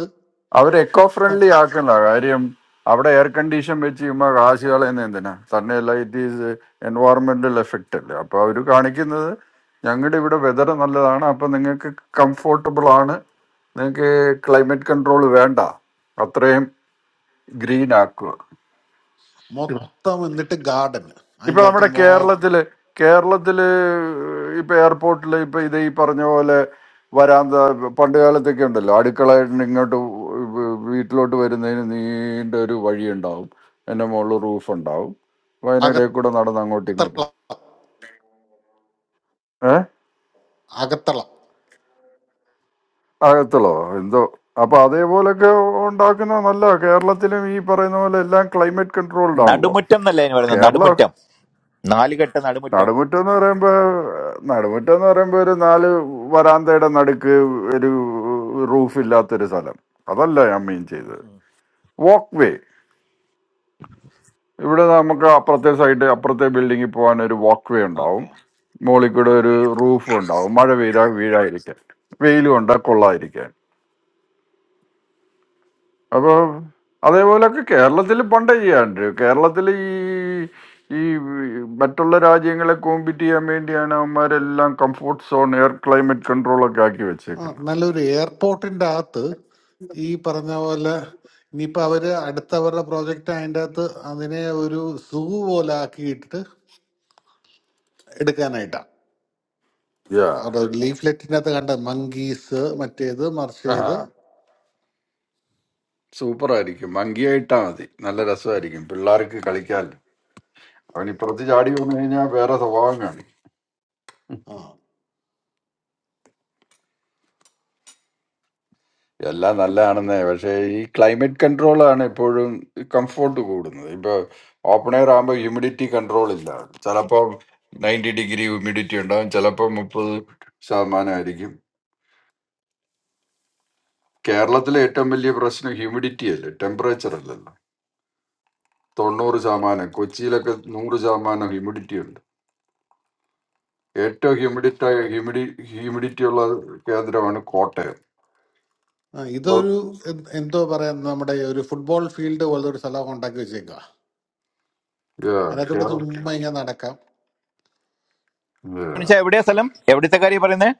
Speaker 14: അവർ എക്കോ ഫ്രണ്ട്ലി
Speaker 11: സ-
Speaker 14: ആക്കണ്ട കാര്യം അവിടെ എയർ കണ്ടീഷൻ വെച്ച് ചുമ്മാ കാശ് കളയുന്ന എന്തിനാ തന്നെയല്ല ഇറ്റ് ഈസ് എൻവയറമെന്റൽ എഫക്റ്റ് അല്ലേ അപ്പൊ അവർ കാണിക്കുന്നത് ഞങ്ങളുടെ ഇവിടെ വെതർ നല്ലതാണ് അപ്പൊ നിങ്ങൾക്ക് കംഫോർട്ടബിൾ ആണ് നിങ്ങൾക്ക് ക്ലൈമറ്റ് കൺട്രോൾ വേണ്ട അത്രയും ഗ്രീൻ ആക്കുക
Speaker 11: മൊത്തം എന്നിട്ട് ഗാർഡൻ
Speaker 14: ഇപ്പൊ
Speaker 11: അതിൻ്റെ അകത്ത്
Speaker 14: നമ്മുടെ
Speaker 11: മൊ
Speaker 14: കേരളത്തില് കേരളത്തില് ഇപ്പൊ എയർപോർട്ടിൽ ഇപ്പൊ ഇത് ഈ പറഞ്ഞ പോലെ വരാന്ത പണ്ട് കാലത്തൊക്കെ ഉണ്ടല്ലോ അടുക്കളയിട്ട് ഇങ്ങോട്ട് വീട്ടിലോട്ട് വരുന്നതിന് നീണ്ട ഒരു വഴി ഉണ്ടാവും എന്റെ മുകളിൽ റൂഫ് ഉണ്ടാവും അപ്പൊ അതിനിടയിൽ കൂടെ നടന്ന് അങ്ങോട്ടും
Speaker 11: അകത്തള
Speaker 14: ഇങ്ങോട്ടും ഏഹ്
Speaker 11: അകത്തള
Speaker 14: അകത്തുള്ളോ എന്തോ അപ്പൊ അതേപോലൊക്കെ ഉണ്ടാക്കുന്ന നല്ല കേരളത്തിലും ഈ പറയുന്ന പോലെ എല്ലാം ക്ലൈമറ്റ് കൺട്രോൾഡ് ആണല്ലോ
Speaker 21: നടുമുറ്റം എന്നല്ലേ അതിന് പറയുന്നത്
Speaker 14: കേരളം
Speaker 21: നടുമുറ്റം നാലുകെട്ട് നടുമുറ്റം
Speaker 14: നടുമുറ്റം എന്ന് പറയുമ്പോ നടുമുറ്റം എന്ന് പറയുമ്പോ ഒരു നാല് വരാന്തയുടെ നടുക്ക് ഒരു റൂഫ് ഇല്ലാത്തൊരു സ്ഥലം അതല്ല ഞാൻ മീൻ ചെയ്തത് വാക്ക് വേ ഇവിടെ നമുക്ക് അപ്പുറത്തെ സൈഡ് അപ്പുറത്തെ ബിൽഡിങ്ങിൽ പോകാൻ ഒരു വാക്ക് വേ ഉണ്ടാവും
Speaker 21: ഓക്കെ
Speaker 14: മുകളിൽ കൂടെ ഒരു റൂഫ് ഉണ്ടാവും മഴ പെയ്താൽ വീഴാതിരിക്കാൻ വെയിലും ഉണ്ടാ കൊള്ളാതിരിക്കാൻ അപ്പൊ അതേപോലൊക്കെ കേരളത്തിൽ പണ്ടേ ചെയ്യാറുണ്ട് കേരളത്തിൽ ഈ ഈ മറ്റുള്ള രാജ്യങ്ങളെ കോമ്പീറ്റ് ചെയ്യാൻ വേണ്ടിയാണ് അവന്മാരെല്ലാം comfort zone air climate control ഒക്കെ ആക്കി
Speaker 11: ആ
Speaker 14: വെച്ചേക്കുന്നത്
Speaker 11: നല്ലൊരു എയർപോർട്ടിൻ്റെ അകത്ത് ഈ പറഞ്ഞ പോലെ ഇനിയിപ്പോൾ അവർ അടുത്തവരുടെ പ്രോജക്റ്റ് അതിൻ്റെ അകത്ത് അതിനെ ഒരു സൂ പോലെ ആക്കിയിട്ട് എടുക്കാനായിട്ടാണ്
Speaker 14: യാ
Speaker 11: അവരുടെ ലീഫ്ലെറ്റിൻ്റെ അകത്ത് കണ്ട മങ്കീസ് മറ്റേത് മറിച്ചേത്
Speaker 14: സൂപ്പർ ആയിരിക്കും മങ്കിയായിട്ടാ മതി നല്ല രസമായിരിക്കും പിള്ളേർക്ക് കളിക്കാൻ അവൻ ഇപ്പുറത്ത് ചാടി വന്നു കഴിഞ്ഞാൽ വേറെ സ്വഭാവം കാണും. എല്ലാം നല്ലതാണെന്നേ പക്ഷേ ഈ ക്ലൈമറ്റ് കൺട്രോളാണ് എപ്പോഴും കംഫോർട്ട് കൂടുന്നത് ഇപ്പോൾ ഓപ്പൺ എയർ ആകുമ്പോൾ ഹ്യൂമിഡിറ്റി കൺട്രോൾ ഇല്ല ചിലപ്പോൾ നയൻറ്റി ഡിഗ്രി ഹ്യൂമിഡിറ്റി ഉണ്ടാകും ചിലപ്പോൾ മുപ്പത് ശതമാനമായിരിക്കും കേരളത്തിലെ ഏറ്റവും വലിയ പ്രശ്നം ഹ്യൂമിഡിറ്റി അല്ലേ ടെമ്പറേച്ചർ അല്ലല്ലോ തൊണ്ണൂറ് ശതമാനം കൊച്ചിയിലൊക്കെ നൂറ് ശതമാനം ഹ്യൂമിഡിറ്റി ഉണ്ട് ഏറ്റവും ഹ്യൂമിഡിറ്റി ഹ്യൂമിഡി ഹ്യൂമിഡിറ്റി ഉള്ള കേന്ദ്രമാണ് കോട്ടയം
Speaker 11: ആ, ഇതൊരു എന്ത് എന്തോ പറയാൻ നമ്മുടെ ഈ ഒരു ഫുട്ബോൾ ഫീൽഡ് പോലത്തെ ഒരു സ്ഥലം ഉണ്ടാക്കി വെച്ചേക്കുക അതിനകത്തോട്ട്
Speaker 14: കേരളം
Speaker 11: ചുമ്മാ ഇങ്ങനെ നടക്കാം
Speaker 21: എവിടെയാ സ്ഥലം എവിടുത്തെ കാര്യം പറയുന്നത്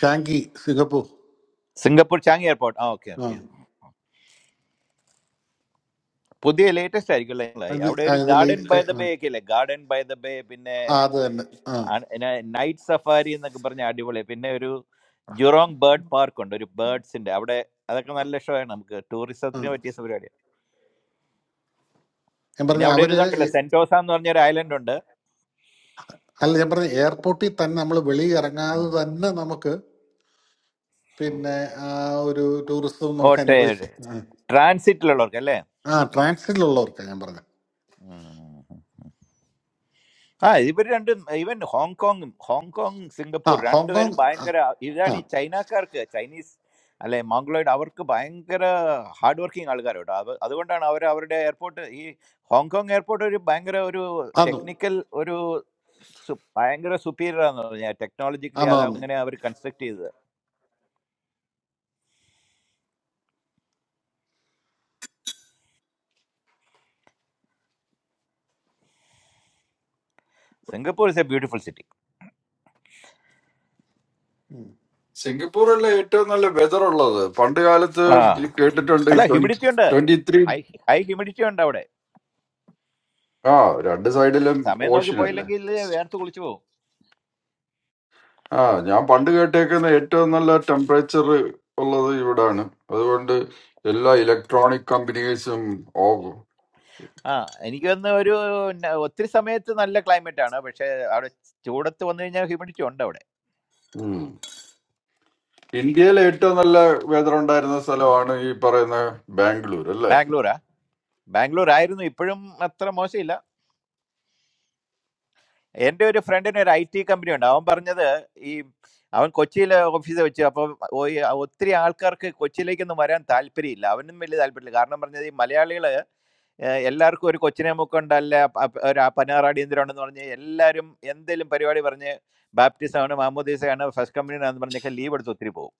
Speaker 11: Changi Singapore
Speaker 21: Singapore Changi airport ആ ഓക്കെ
Speaker 11: ആ
Speaker 21: ഓക്കെ പുതിയ ലേറ്റസ്റ്റ് ആയിരിക്കും അല്ലേ? നിങ്ങളായി.
Speaker 11: അത്
Speaker 21: അവിടെ ഒരു
Speaker 11: അതിൽ
Speaker 21: ഗാർഡൻ ബൈ ദ ബേ ഒക്കെ ഇല്ലേ ഗാർഡൻ ബൈ ദ ബേ പിന്നെ
Speaker 11: ആ അത് തന്നെ ആ
Speaker 21: നൈറ്റ് സഫാരി എന്നൊക്കെ പറഞ്ഞ അടിപൊളി പിന്നെ ഒരു ജുറോങ് ബേർഡ് പാർക്ക് ഉണ്ട് ഒരു ബേർഡ്സിന്റെ അവിടെ അതൊക്കെ നല്ല ഷോ ആണ് നമുക്ക്
Speaker 11: ആ
Speaker 21: ടൂറിസത്തിന് പറ്റിയ പരിപാടിയാണ്
Speaker 11: ഞാൻ
Speaker 21: പിന്നെ
Speaker 11: പറഞ്ഞ
Speaker 21: അവിടെ ഒരു
Speaker 11: അവര്
Speaker 21: ഇതുണ്ടല്ലോ
Speaker 11: ഈ-
Speaker 21: സെന്റോസ എന്ന് പറഞ്ഞ ഒരു ഐലൻഡ് ഉണ്ട്
Speaker 11: അല്ല ഞാൻ പറഞ്ഞ എയർപോർട്ടിൽ തന്നെ നമ്മൾ വെളിയിൽ ഇറങ്ങാതെ
Speaker 21: ഉം.
Speaker 11: തന്നെ നമുക്ക് പിന്നെ ആ ഒരു ടൂറിസം നമുക്ക്
Speaker 21: കോട്ടയം
Speaker 11: അനുഭവിക്കാം ആ
Speaker 21: ട്രാൻസിറ്റിലുള്ളവർക്ക് അല്ലേ
Speaker 11: ആ, ട്രാൻസിറ്റിലുള്ളവർക്കാ ഞാൻ പറഞ്ഞത്
Speaker 21: ഉം. ആ ഇവർ രണ്ടും ഈവൻ ഹോങ്കോങ്ങും ഹോങ്കോങ്
Speaker 11: ആ
Speaker 21: സിംഗപ്പൂർ രണ്ടുപേരും
Speaker 11: ഹോങ്കോങ് ആ
Speaker 21: ഭയങ്കര
Speaker 11: ആ,
Speaker 21: ഇതാണ് ഈ ചൈനക്കാർക്ക് ചൈനീസ് അല്ലെ മംഗ്ലോയിഡ് അവർക്ക് ഭയങ്കര ഹാർഡ് വർക്കിംഗ് ആൾക്കാർ കേട്ടോ അത് അതുകൊണ്ടാണ് അവർ അവരുടെ എയർപോർട്ട് ഈ ഹോങ്കോങ് എയർപോർട്ട് ഒരു ഭയങ്കര ഒരു
Speaker 11: ആന്നു
Speaker 21: ടെക്നിക്കൽ ഒരു സു- ഭയങ്കര superior ആണെന്ന് പറഞ്ഞാൽ ടെക്നോളജിക്കലി
Speaker 11: ആന്നു
Speaker 21: അത്
Speaker 11: ആന്നു
Speaker 21: അങ്ങനെ അവർ കൺസ്ട്രക്ട് ചെയ്തത് Singapore is a beautiful city
Speaker 14: സിംഗപ്പൂറല്ലേ ഏറ്റവും നല്ല വെതർ ഉള്ളത് പണ്ട് കാലത്ത്
Speaker 21: ആ
Speaker 14: ഈ കേട്ടിട്ടുണ്ട്
Speaker 21: അല്ല ഹ്യൂമിഡിറ്റി ഉണ്ട്
Speaker 14: twenty three
Speaker 21: high high humidity ഉണ്ട് അവിടെ
Speaker 14: ആ രണ്ട് സൈഡിലും
Speaker 21: സമയം നോക്കി
Speaker 14: ഓഷ്യൻ അല്ലേ
Speaker 21: പോയില്ലെങ്കിൽ വേർത്ത് കുളിച്ചു പോകും
Speaker 14: ആ ഞാൻ പണ്ട് കേട്ടേക്കുന്ന ഏറ്റവും നല്ല ടെമ്പറേച്ചർ ഉള്ളത് ഇവിടാണ് അതുകൊണ്ട് എല്ലാ ഇലക്ട്രോണിക് കമ്പനീസും ഓ-
Speaker 21: ആ എനിക്ക് വന്ന് ഒരു ന- ഒത്തിരി സമയത്ത് നല്ല ക്ലൈമറ്റ് ആണ് പക്ഷെ അവിടെ ചൂടത്ത് വന്നു കഴിഞ്ഞാൽ ഹ്യൂമിഡിറ്റി ഉണ്ട് അവിടെ
Speaker 14: ഉം. ഇന്ത്യയിലെ ഏറ്റവും നല്ല വെതർ ഉണ്ടായിരുന്ന സ്ഥലമാണ് ഈ പറയുന്ന ബാംഗ്ലൂർ അല്ലേ
Speaker 21: ബാംഗ്ലൂരാ ബാംഗ്ലൂർ ആയിരുന്നു ഇപ്പോഴും അത്ര മോശമില്ല എൻ്റെ ഒരു ഫ്രണ്ടിന് ഒരു ഐ ടി കമ്പനി ഉണ്ട് അവൻ പറഞ്ഞത് ഈ അവൻ കൊച്ചിയിലെ ഓഫീസിൽ വെച്ച് അപ്പോൾ ഒത്തിരി ആൾക്കാർക്ക് കൊച്ചിയിലേക്കൊന്നും വരാൻ താല്പര്യമില്ല അവനും വലിയ താല്പര്യമില്ല കാരണം പറഞ്ഞത് ഈ മലയാളികൾ ഏഹ് എല്ലാവർക്കും ഒരു കൊച്ചിനെ മൂക്കുണ്ടല്ല പ- ഒരു പതിനാറാടിയന്തിരമുണ്ടെന്ന് പറഞ്ഞ് എല്ലാവരും എന്തെങ്കിലും പരിപാടി പറഞ്ഞ് ബാപ്റ്റിസമാണ് മാമോദീസയാണ് ഫസ്റ്റ് കമ്പനിയാണെന്ന് പറഞ്ഞൊക്കെ ലീവ് എടുത്ത് ഒത്തിരി പോകും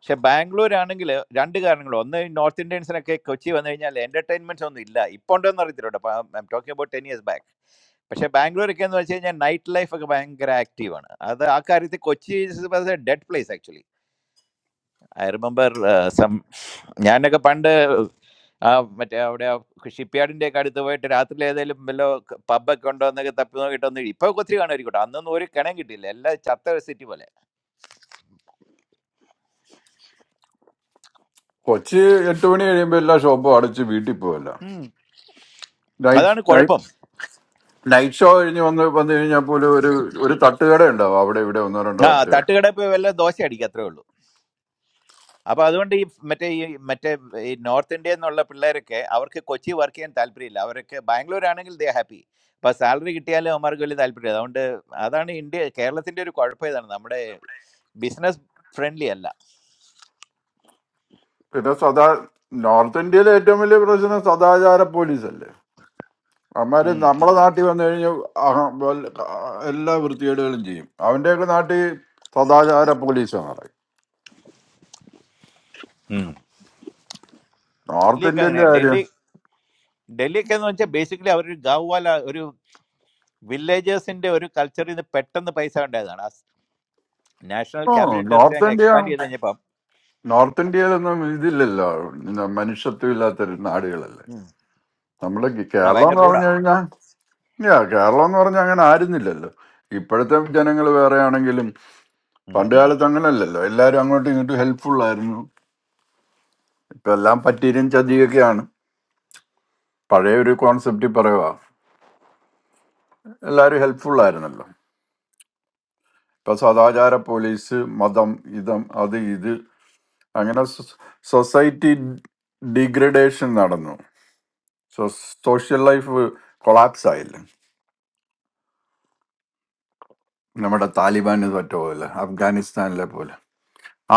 Speaker 21: പക്ഷെ ബാംഗ്ലൂർ ആണെങ്കിൽ രണ്ട് കാരണങ്ങൾ ഒന്ന് ഈ നോർത്ത് ഇന്ത്യൻസിനൊക്കെ കൊച്ചി വന്നു കഴിഞ്ഞാൽ എന്റർടൈൻമെന്റ്സ് ഒന്നും ഇല്ല ഇപ്പോൾ ഉണ്ടോയെന്ന് അറിയത്തില്ല കേട്ടോ I'm talking about ten years back പക്ഷെ ബാംഗ്ലൂരൊക്കെ എന്ന് വെച്ച് കഴിഞ്ഞാൽ നൈറ്റ് ലൈഫ് ഒക്കെ ഭയങ്കര ആക്റ്റീവ് ആണ് അത് ആ കാര്യത്തിൽ Kochi dead place actually I remember some ഞാനൊക്കെ പണ്ട് ആ മറ്റേ അവിടെ ഷിപ്പ്യാർഡിന്റെ ഒക്കെ അടുത്ത് പോയിട്ട് രാത്രി ഏതെങ്കിലും വല്ല പബ്ബൊക്കെ ഉണ്ടോ എന്നൊക്കെ തപ്പി നോക്കിയിട്ട് ഒന്ന് ഇപ്പൊ ഒത്തിരി കാണുമായിരിക്കട്ടെ അന്നൊന്നും ഒരു കിണം കിട്ടിയില്ല എല്ലാ ചത്ത സിറ്റി പോലെ
Speaker 14: അല്ല
Speaker 21: ഉം.
Speaker 14: നൈറ്റ്
Speaker 21: അതാണ്
Speaker 14: നൈറ്റ്
Speaker 21: കുഴപ്പം
Speaker 14: നൈറ്റ് ഷോ കഴിഞ്ഞ് വന്ന് വന്നു കഴിഞ്ഞാൽ പോലും ഒരു തട്ടുകട ഉണ്ടാവും അവിടെ ഇവിടെ ഒന്നോ രണ്ടോ
Speaker 21: ആ
Speaker 14: തട്ടുകട
Speaker 21: തട്ടുകട പോയി വല്ല ദോശ അടിക്കുക അത്രേ ഉള്ളൂ അപ്പൊ അതുകൊണ്ട് ഈ മറ്റേ ഈ മറ്റേ ഈ നോർത്ത് ഇന്ത്യയിൽ നിന്നുള്ള പിള്ളേരൊക്കെ അവർക്ക് കൊച്ചി വർക്ക് ചെയ്യാൻ താല്പര്യമില്ല അവരൊക്കെ ബാംഗ്ലൂർ ആണെങ്കിൽ ദേ ഹാപ്പി അപ്പൊ സാലറി കിട്ടിയാലും അവന്മാർക്ക് വലിയ താല്പര്യമില്ല അതുകൊണ്ട് അതാണ് ഇന്ത്യ കേരളത്തിന്റെ ഒരു കുഴപ്പം ഇതാണ് നമ്മുടെ ബിസിനസ് ഫ്രണ്ട്ലി അല്ല
Speaker 14: പിന്നെ സദാ നോർത്ത് ഇന്ത്യയിലെ ഏറ്റവും വലിയ പ്രശ്നം സദാചാര പോലീസല്ലേ അവന്മാര്
Speaker 21: ഉം.
Speaker 14: നമ്മളെ നാട്ടിൽ വന്നു കഴിഞ്ഞാൽ അഹ- വല്ല- എല്ലാ വൃത്തികേടുകളും ചെയ്യും അവന്റെയൊക്കെ നാട്ടിൽ സദാചാര പോലീസാണ് പറയും
Speaker 21: ഉം.
Speaker 14: നോർത്ത്
Speaker 21: ഡൽഹിയൊക്കെ
Speaker 14: ഇന്ത്യന്റെ
Speaker 21: അങ്ങനെയാ ഡൽഹി
Speaker 14: കാര്യം
Speaker 21: ഡൽഹിയൊക്കെ എന്ന് വെച്ചാൽ ബേസിക്കലി അവരൊരു ഗവ്വാല ഒരു വില്ലേജേഴ്സിന്റെ ഒരു കൾച്ചറിൽ നിന്ന് പെട്ടെന്ന് പൈസ ഉണ്ടായതാണ് ആ national
Speaker 14: uh
Speaker 21: capital territory
Speaker 14: north
Speaker 21: അങ്ങ്
Speaker 14: ഇന്ത്യ
Speaker 21: എക്സ്പാൻഡ് ചെയ്ത് കഴിഞ്ഞപ്പം
Speaker 14: നോർത്ത് ഇന്ത്യയിലൊന്നും ഇതില്ലല്ലോ പിന്നെ മനുഷ്യത്വം ഇല്ലാത്തൊരു നാടുകളല്ലേ
Speaker 21: ഉം.
Speaker 14: നമ്മള് കേ-
Speaker 21: ആ
Speaker 14: കേരളം
Speaker 21: ഭയങ്കര
Speaker 14: എന്ന്
Speaker 21: റൂഡാ
Speaker 14: പറഞ്ഞു കഴിഞ്ഞാൽ യാ കേരളം എന്ന് പറഞ്ഞാൽ അങ്ങനെ ആയിരുന്നില്ലല്ലോ ഇപ്പോഴത്തെ ജനങ്ങൾ വേറെ ആണെങ്കിലും പണ്ട് കാലത്ത് അങ്ങനല്ലല്ലോ എല്ലാവരും അങ്ങോട്ടും ഇങ്ങോട്ടും ഹെൽപ്ഫുൾ ആയിരുന്നു ഇപ്പൊ എല്ലാം പറ്റീരും ചതിയൊക്കെയാണ് പഴയ ഒരു കോൺസെപ്റ്റ് പറയുക എല്ലാവരും ഹെൽപ്ഫുൾ ആയിരുന്നല്ലോ ഇപ്പൊ സദാചാര പോലീസ് മതം ഇതം അത് ഇത് അങ്ങനെ സൊസൈറ്റി ഡിഗ്രഡേഷൻ നടന്നു സോ സോഷ്യൽ ലൈഫ് കൊളാപ്സ് ആയില്ല നമ്മുടെ താലിബാന് തോറ്റ പോലെ അഫ്ഗാനിസ്ഥാനിലെ പോലെ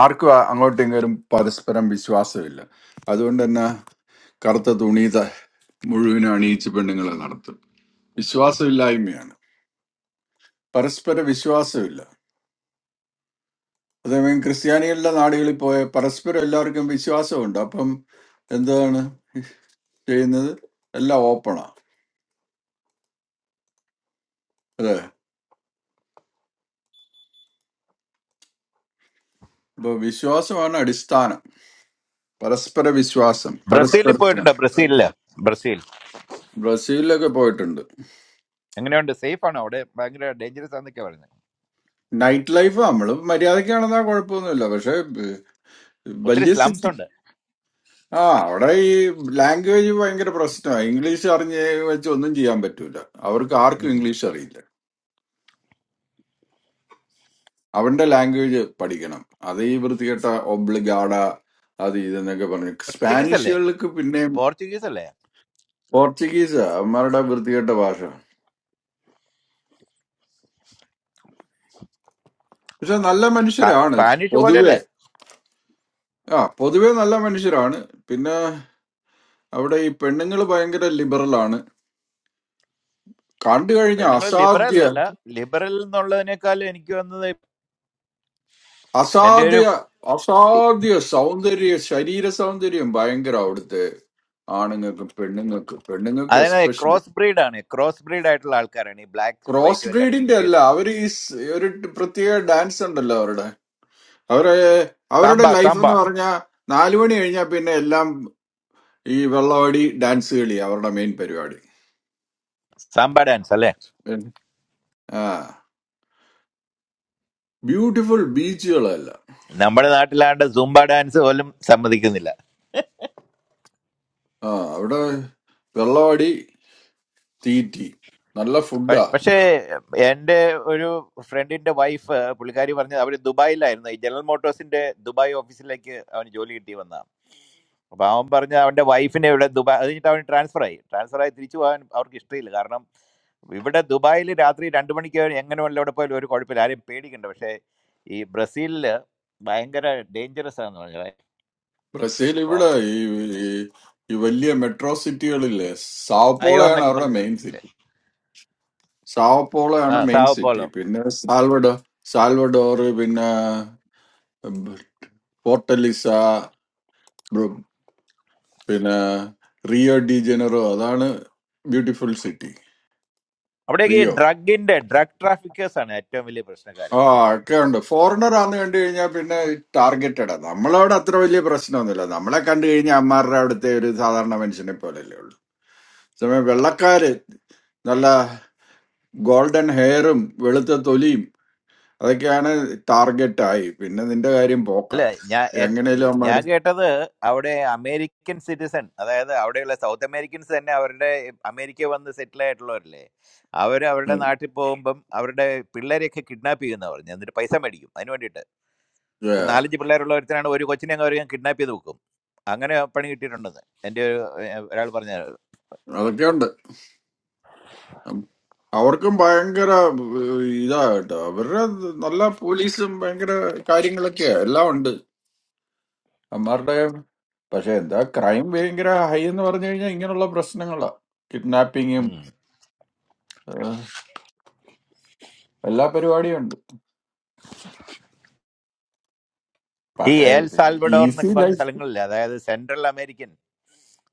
Speaker 14: ആർക്കും ആ- അങ്ങോട്ടും ഇങ്ങോട്ടും പരസ്പരം വിശ്വാസമില്ല അതുകൊണ്ട് തന്നെ കറുത്ത തുണി ത- മുഴുവനും അണിയിച്ച് പെണ്ണുങ്ങളെ നടത്തും വിശ്വാസമില്ലായ്മയാണ് പരസ്പര വിശ്വാസമില്ല അതേമയം ക്രിസ്ത്യാനികളുടെ നാടുകളിൽ പോയ പരസ്പരം എല്ലാവർക്കും വിശ്വാസമുണ്ട് അപ്പം എന്താണ് ചെയ്യുന്നത് എല്ലാം ഓപ്പണാ അതെ അപ്പൊ വിശ്വാസമാണ് അടിസ്ഥാനം പരസ്പര വിശ്വാസം പരസ്പര
Speaker 21: ബ്രസീലിൽ
Speaker 14: സ്നേഹം.
Speaker 21: പോയിട്ടുണ്ടോ ബ്രസീലില് ബ്രസീൽ
Speaker 14: ബ്രസീലിലൊക്കെ പോയിട്ടുണ്ട്
Speaker 21: എങ്ങനെയുണ്ട് സേഫ് ആണോ അവിടെ ഭയങ്കര ഡേഞ്ചറസ് ആണെന്നൊക്കെ പറയുന്നത്
Speaker 14: നൈറ്റ് ലൈഫ് നമ്മൾ മര്യാദക്കാണെന്നാ കുഴപ്പമൊന്നുമില്ല പക്ഷെ ബ്-
Speaker 21: ഒത്തിരി
Speaker 14: വലിയ
Speaker 21: സ്ലംസ്
Speaker 14: സിറ്റി
Speaker 21: ഉണ്ട്
Speaker 14: ആ അവിടെ ഈ ലാംഗ്വേജ് ഭയങ്കര പ്രശ്നമാണ് ഇംഗ്ലീഷ് അറിഞ്ഞ് വെച്ച് ഒന്നും ചെയ്യാൻ പറ്റൂല അവർക്ക് ആർക്കും
Speaker 21: ഉം.
Speaker 14: ഇംഗ്ലീഷ് അറിയില്ല അവന്റെ ലാംഗ്വേജ് പഠിക്കണം അത് ഈ വൃത്തികെട്ട ഒബ്ലിഗാഡ അത് ഇതെന്നൊക്കെ പറഞ്ഞു
Speaker 21: പോർച്ചുഗീസ് അല്ലേ
Speaker 14: സ്പാനിഷുകൾക്ക് പിന്നെയും
Speaker 21: പോർച്ചുഗീസ് അല്ലേ
Speaker 14: പോർച്ചുഗീസ് അവന്മാരുടെ വൃത്തികെട്ട ഭാഷ പക്ഷെ നല്ല
Speaker 21: സ്പാ-
Speaker 14: മനുഷ്യരാണ്
Speaker 21: സ്പാനിഷ് പോലെ
Speaker 14: പൊതുവെ
Speaker 21: അല്ലേ
Speaker 14: ആ പൊതുവെ നല്ല മനുഷ്യരാണ് പിന്നെ അവിടെ ഈ പെണ്ണുങ്ങൾ ഭയങ്കര ലിബറലാണ് കണ്ടു കഴിഞ്ഞ
Speaker 21: പെണ്ണുങ്ങൾ ലിബറൽ
Speaker 14: അസാധ്യ
Speaker 21: അല്ല ലിബറൽ എന്നുള്ളതിനേക്കാൾ എനിക്ക് വന്നത് എന്റെ ഒരു
Speaker 14: അസാധ്യ അസാധ്യ സൗന്ദര്യ ശരീര സൗന്ദര്യം ഭയങ്കര അവിടുത്തെ ആണുങ്ങൾക്കും പെണ്ണുങ്ങൾക്കും പെണ്ണുങ്ങൾക്ക്
Speaker 21: അതായത്
Speaker 14: എസ്പെഷ്യലി
Speaker 21: ക്രോസ് ബ്രീഡാണ് ക്രോസ് ബ്രീഡ് ആയിട്ടുള്ള ആൾക്കാരാണ് ഈ ബ്ലാക്കും
Speaker 14: ക്രോസ്
Speaker 21: വൈറ്റും എല്ലാവരും മിക്സ്
Speaker 14: ബ്രീഡിന്റെ
Speaker 21: ചെയ്ത്
Speaker 14: അല്ല അവർ ഈ സ് ഒരു ട് പ്രത്യേക ഡാൻസ് ഉണ്ടല്ലോ അവരുടെ അവരെ അവരുടെ
Speaker 21: സാമ്പ
Speaker 14: ലൈഫ്
Speaker 21: സാമ്പ
Speaker 14: എന്ന് പറഞ്ഞാൽ നാലു മണി കഴിഞ്ഞാൽ പിന്നെ എല്ലാം ഈ വെള്ളവാടി ഡാൻസ് കളി അവരുടെ മെയിൻ പരിപാടി
Speaker 21: സാമ്പ ഡാൻസ് അല്ലേ
Speaker 14: പിന്നെ, ആ ബ്യൂട്ടിഫുൾ ബീച്ചുകളല്ല
Speaker 21: നമ്മുടെ നാട്ടിലാണ്ട് സുംബ ഡാൻസ് പോലും സമ്മതിക്കുന്നില്ല
Speaker 14: ആ അവിടെ വെള്ളവാടി തീറ്റി നല്ല
Speaker 21: പ-
Speaker 14: ഫുഡാ
Speaker 21: പക്ഷേ എൻ്റെ ഒരു ഫ്രണ്ടിന്റെ വൈഫ് പുള്ളിക്കാരി പറഞ്ഞത് അവര് ദുബായിലായിരുന്നു ഈ ജനറൽ മോട്ടോഴ്സിന്റെ ദുബായ് ഓഫീസിലേക്ക് അവന് ജോലി കിട്ടി വന്ന അപ്പൊ അവൻ പറഞ്ഞ അവന്റെ വൈഫിനെ ഇവിടെ ദുബായ് അത് കഴിഞ്ഞിട്ട് അവന് ട്രാൻസ്ഫർ ആയി ട്രാൻസ്ഫർ ആയി തിരിച്ചു പോകാൻ അവർക്ക് ഇഷ്ടമില്ല കാരണം ഇവിടെ ദുബായിൽ രാത്രി രണ്ട് മണിക്ക് എങ്ങനെ വല്ല എവിടെ പോയാലും ഒരു കുഴപ്പമില്ല ആരെയും പേടിക്കണ്ട പക്ഷേ ഈ ബ്രസീലില് ഭയങ്കര ഡേഞ്ചറസ് ആണെന്ന് പറഞ്ഞത്
Speaker 14: ബ്രസീൽ ഇവിടെ ഈ ഈ ഈ വലിയ മെട്രോ സിറ്റികളില്ലേ
Speaker 21: ഭയോ
Speaker 14: സാവപ്പോളയാണ്
Speaker 21: എന്നൊക്കെ
Speaker 14: അവരുടെ
Speaker 21: പറഞ്ഞ
Speaker 14: മെയിൻ
Speaker 21: സ്ഥലത്തേക്കില്ലേ
Speaker 14: സിറ്റി
Speaker 21: ആ
Speaker 14: സാവപ്പോളയാണ് മെയിൻ സിറ്റി
Speaker 21: സാവപ്പോലോ
Speaker 14: പിന്നെ സാൽവഡോ സാൽവഡോർ പിന്നെ ഉം, ഫോർട്ടലിസ ബ്രു- പിന്നെ റിയോ ഡി ജനറോ അതാണ് ബ്യൂട്ടിഫുൾ സിറ്റി
Speaker 21: അവിടെയൊക്കെ ഈ
Speaker 14: റിയോ
Speaker 21: ഡ്രഗിന്റെ ഡ്രഗ് ട്രാഫിക്കേഴ്സ് ആണ് ഏറ്റവും വലിയ പ്രശ്നക്കാര്
Speaker 14: ആ ഒക്കെ ഉണ്ട് ഫോറിനർ ആന്ന് കണ്ടു കഴിഞ്ഞാൽ പിന്നെ ടാർഗറ്റഡ് നമ്മളവിടെ അത്ര വലിയ പ്രശ്നമൊന്നുമില്ല നമ്മളെ കണ്ടു കഴിഞ്ഞാൽ അമ്മാരുടെ അവിടുത്തെ ഒരു സാധാരണ മനുഷ്യനെ പോലെയല്ലേ ഉള്ളൂ സമയം വെള്ളക്കാര് നല്ല ഗോൾഡൻ ഹെയറും വെളുത്ത തൊലിയും അതൊക്കെയാണ് ടാർഗറ്റായി പിന്നെ നിന്റെ കാര്യം പോക്ക
Speaker 21: അല്ല ഞാൻ എൻ-
Speaker 14: എങ്ങനെയാലും
Speaker 21: ഞാൻ
Speaker 14: അമ്മാര്
Speaker 21: കേട്ടത് അവിടെ അമേരിക്കൻ സിറ്റിസൺ അതായത് അവിടെയുള്ള സൗത്ത് അമേരിക്കൻസ് തന്നെ അവരുടെ അമേരിക്ക വന്ന് സെറ്റിൽ ആയിട്ടുള്ളവരല്ലേ അവർ അവരുടെ
Speaker 14: ഉം.
Speaker 21: നാട്ടിൽ പോകുമ്പം അവരുടെ പിള്ളേരെയൊക്കെ കിഡ്നാപ്പ് ചെയ്യുന്ന പറഞ്ഞു എന്നിട്ട് പൈസ മേടിക്കും അതിന് വേണ്ടിയിട്ട് ഇപ്പം
Speaker 14: Yeah.
Speaker 21: നാലഞ്ച് പിള്ളേരുള്ള ഒരുത്തനാണ് ഒരു കൊച്ചിനെ അങ്ങ് അവർ ഞാൻ കിഡ്നാപ്പ് ചെയ്ത് വെക്കും അങ്ങനെ പണി കിട്ടിയിട്ടുണ്ടെന്ന് എൻ്റെ ഒരു ഏഹ്, ഒരാൾ പറഞ്ഞ
Speaker 14: അതൊക്കെ ഉണ്ട് ഉം. അവർക്കും ഭയങ്കര ഏഹ്, ഇതാ കേട്ടോ അവരുടെ നല്ല പോലീസും ഭയങ്കര കാര്യങ്ങളൊക്കെയാ എല്ലാം ഉണ്ട് അമ്മാരുടെ പക്ഷെ എന്താ ക്രൈം ഭയങ്കര ഹൈ എന്ന് പറഞ്ഞു കഴിഞ്ഞാൽ ഇങ്ങനെയുള്ള പ്രശ്നങ്ങളാ കിഡ്നാപ്പിങ്ങും ഏഹ്, എല്ലാ പരിപാടിയും ഉണ്ട്
Speaker 21: ഈ
Speaker 14: പക്ഷേ
Speaker 21: എൽ സാൽവഡോർ
Speaker 14: ഈസി
Speaker 21: എന്നൊക്കെ പറഞ്ഞ
Speaker 14: ലൈഫ്
Speaker 21: സ്ഥലങ്ങളില്ലേ അതായത് സെൻട്രൽ അമേരിക്കൻ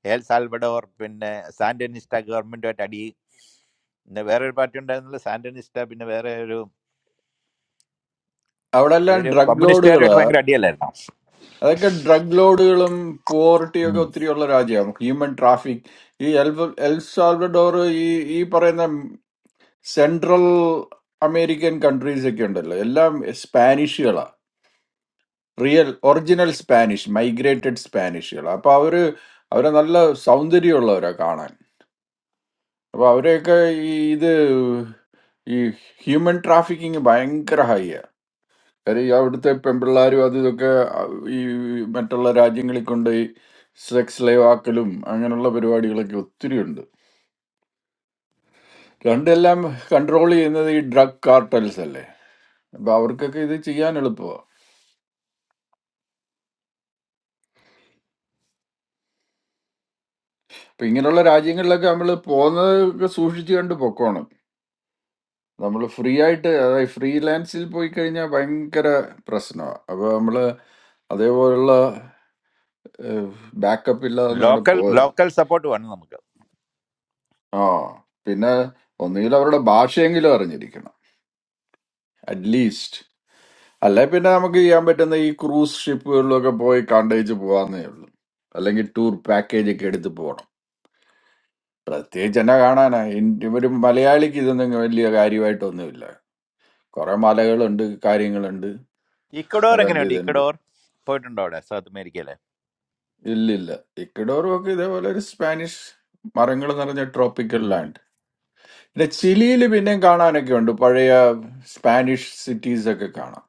Speaker 21: എൽ സാൽവഡോർ പിന്നെ സാൻഡനിസ്റ്റ ഗവൺമെന്റുമായിട്ട് അടി പിന്നെ വേറെ ഒരു പാർട്ടി ഉണ്ടായിരുന്നില്ല സാൻഡനിസ്റ്റ പിന്നെ വേറെ ഒരു
Speaker 14: അവിടെ
Speaker 21: ഈ
Speaker 14: എല്ലാം
Speaker 21: ഒരു
Speaker 14: ഡ്രഗ്
Speaker 21: കമ്മ്യൂണിസ്റ്റുകാരുമായിട്ട്
Speaker 14: ലോഡുകള്
Speaker 21: ഭയങ്കര അടിയല്ലായിരുന്നോ
Speaker 14: അതൊക്കെ ഡ്രഗ് ലോഡുകളും പോവർട്ടിയും ഒക്കെ
Speaker 21: ഉം.
Speaker 14: ഒത്തിരി ഉള്ള രാജ്യമാണ് ഹ്യൂമൻ ട്രാഫിക് ഈ എൽ എൽ സാൽവഡോർ ഈ ഈ പറയുന്ന സെൻട്രൽ അമേരിക്കൻ കൺട്രീസ് ഒക്കെ ഉണ്ടല്ലോ എല്ലാം സ്പാനിഷുകളാ റിയൽ ഒറിജിനൽ സ്പാനിഷ് മൈഗ്രേറ്റഡ് സ്പാനിഷുകൾ അപ്പൊ അവര് അവരെ നല്ല സൗന്ദര്യമുള്ളവരാ കാണാൻ അപ്പൊ അവരെയൊക്കെ ഈ ഇത് ഈ ഹ്യൂമൻ ട്രാഫിക്കിങ് ഭയങ്കര ഹൈ ആ കാര്യം ഈ അവിടുത്തെ പെമ്പിള്ളാരും അത് ഇതൊക്കെ ഈ മറ്റുള്ള രാജ്യങ്ങളിൽ കൊണ്ടുപോയി സെക്സ് ലൈവ് ആക്കലും അങ്ങനെയുള്ള പരിപാടികളൊക്കെ ഒത്തിരി ഉണ്ട് രണ്ടെല്ലാം കൺട്രോൾ ചെയ്യുന്നത് ഈ ഡ്രഗ് കാർട്ടൽസ് അല്ലേ അപ്പൊ അവർക്കൊക്കെ ഇത് ചെയ്യാൻ എളുപ്പമാണ് അപ്പൊ ഇങ്ങനെയുള്ള രാജ്യങ്ങളിലൊക്കെ നമ്മൾ പോകുന്നതൊക്കെ സൂക്ഷിച്ചു കണ്ട് പൊക്കോണം നമ്മൾ ഫ്രീ ആയിട്ട് അതായത് ഫ്രീലാൻസിൽ പോയി കഴിഞ്ഞാൽ ഭയങ്കര പ്രശ്നമാണ് അപ്പൊ നമ്മൾ അതേപോലുള്ള ബാക്കപ്പ് ഇല്ലാതെ ഒന്നും അവിടെ
Speaker 21: ലോക്കൽ
Speaker 14: പോകരുത്
Speaker 21: ലോക്കൽ സപ്പോർട്ട് വേണം നമുക്ക്
Speaker 14: ആ പിന്നെ ഒന്നുകിൽ അവരുടെ ഭാഷയെങ്കിലും അറിഞ്ഞിരിക്കണം അറ്റ്ലീസ്റ്റ് അല്ലെ പിന്നെ നമുക്ക് ചെയ്യാൻ പറ്റുന്ന ഈ ക്രൂസ് ഷിപ്പുകളിലൊക്കെ പോയി കണ്ടേച്ച് പോകാന്നേ ഉള്ളൂ അല്ലെങ്കിൽ ടൂർ പാക്കേജ് ഒക്കെ എടുത്ത് പോകണം പ്രത്യേകിച്ച് എന്നെ കാണാനാ ഇൻ- ഒരു മലയാളിക്ക് ഇതൊന്നും വലിയ കാര്യമായിട്ടൊന്നുമില്ല കുറെ മലകളുണ്ട് കാര്യങ്ങളുണ്ട്
Speaker 21: ഇക്കഡോർ
Speaker 14: അതുണ്ട്
Speaker 21: എങ്ങനെയുണ്ട്
Speaker 14: ഇതുണ്ട്
Speaker 21: ഇക്കഡോർ പോയിട്ടുണ്ടോ അവിടെ സൗത്ത് അമേരിക്കയിലെ
Speaker 14: ഇല്ലില്ല ഇക്കഡോറുമൊക്കെ ഇതേപോലെ ഒരു സ്പാനിഷ് മരങ്ങൾ നിറഞ്ഞ ട്രോപ്പിക്കൽ
Speaker 21: ഉം.
Speaker 14: ലാൻഡ് പിന്നെ ചിലിയിൽ പിന്നെയും കാണാനൊക്കെ ഉണ്ട് പഴയ സ്പാനിഷ് സിറ്റീസ് ഒക്കെ കാണാം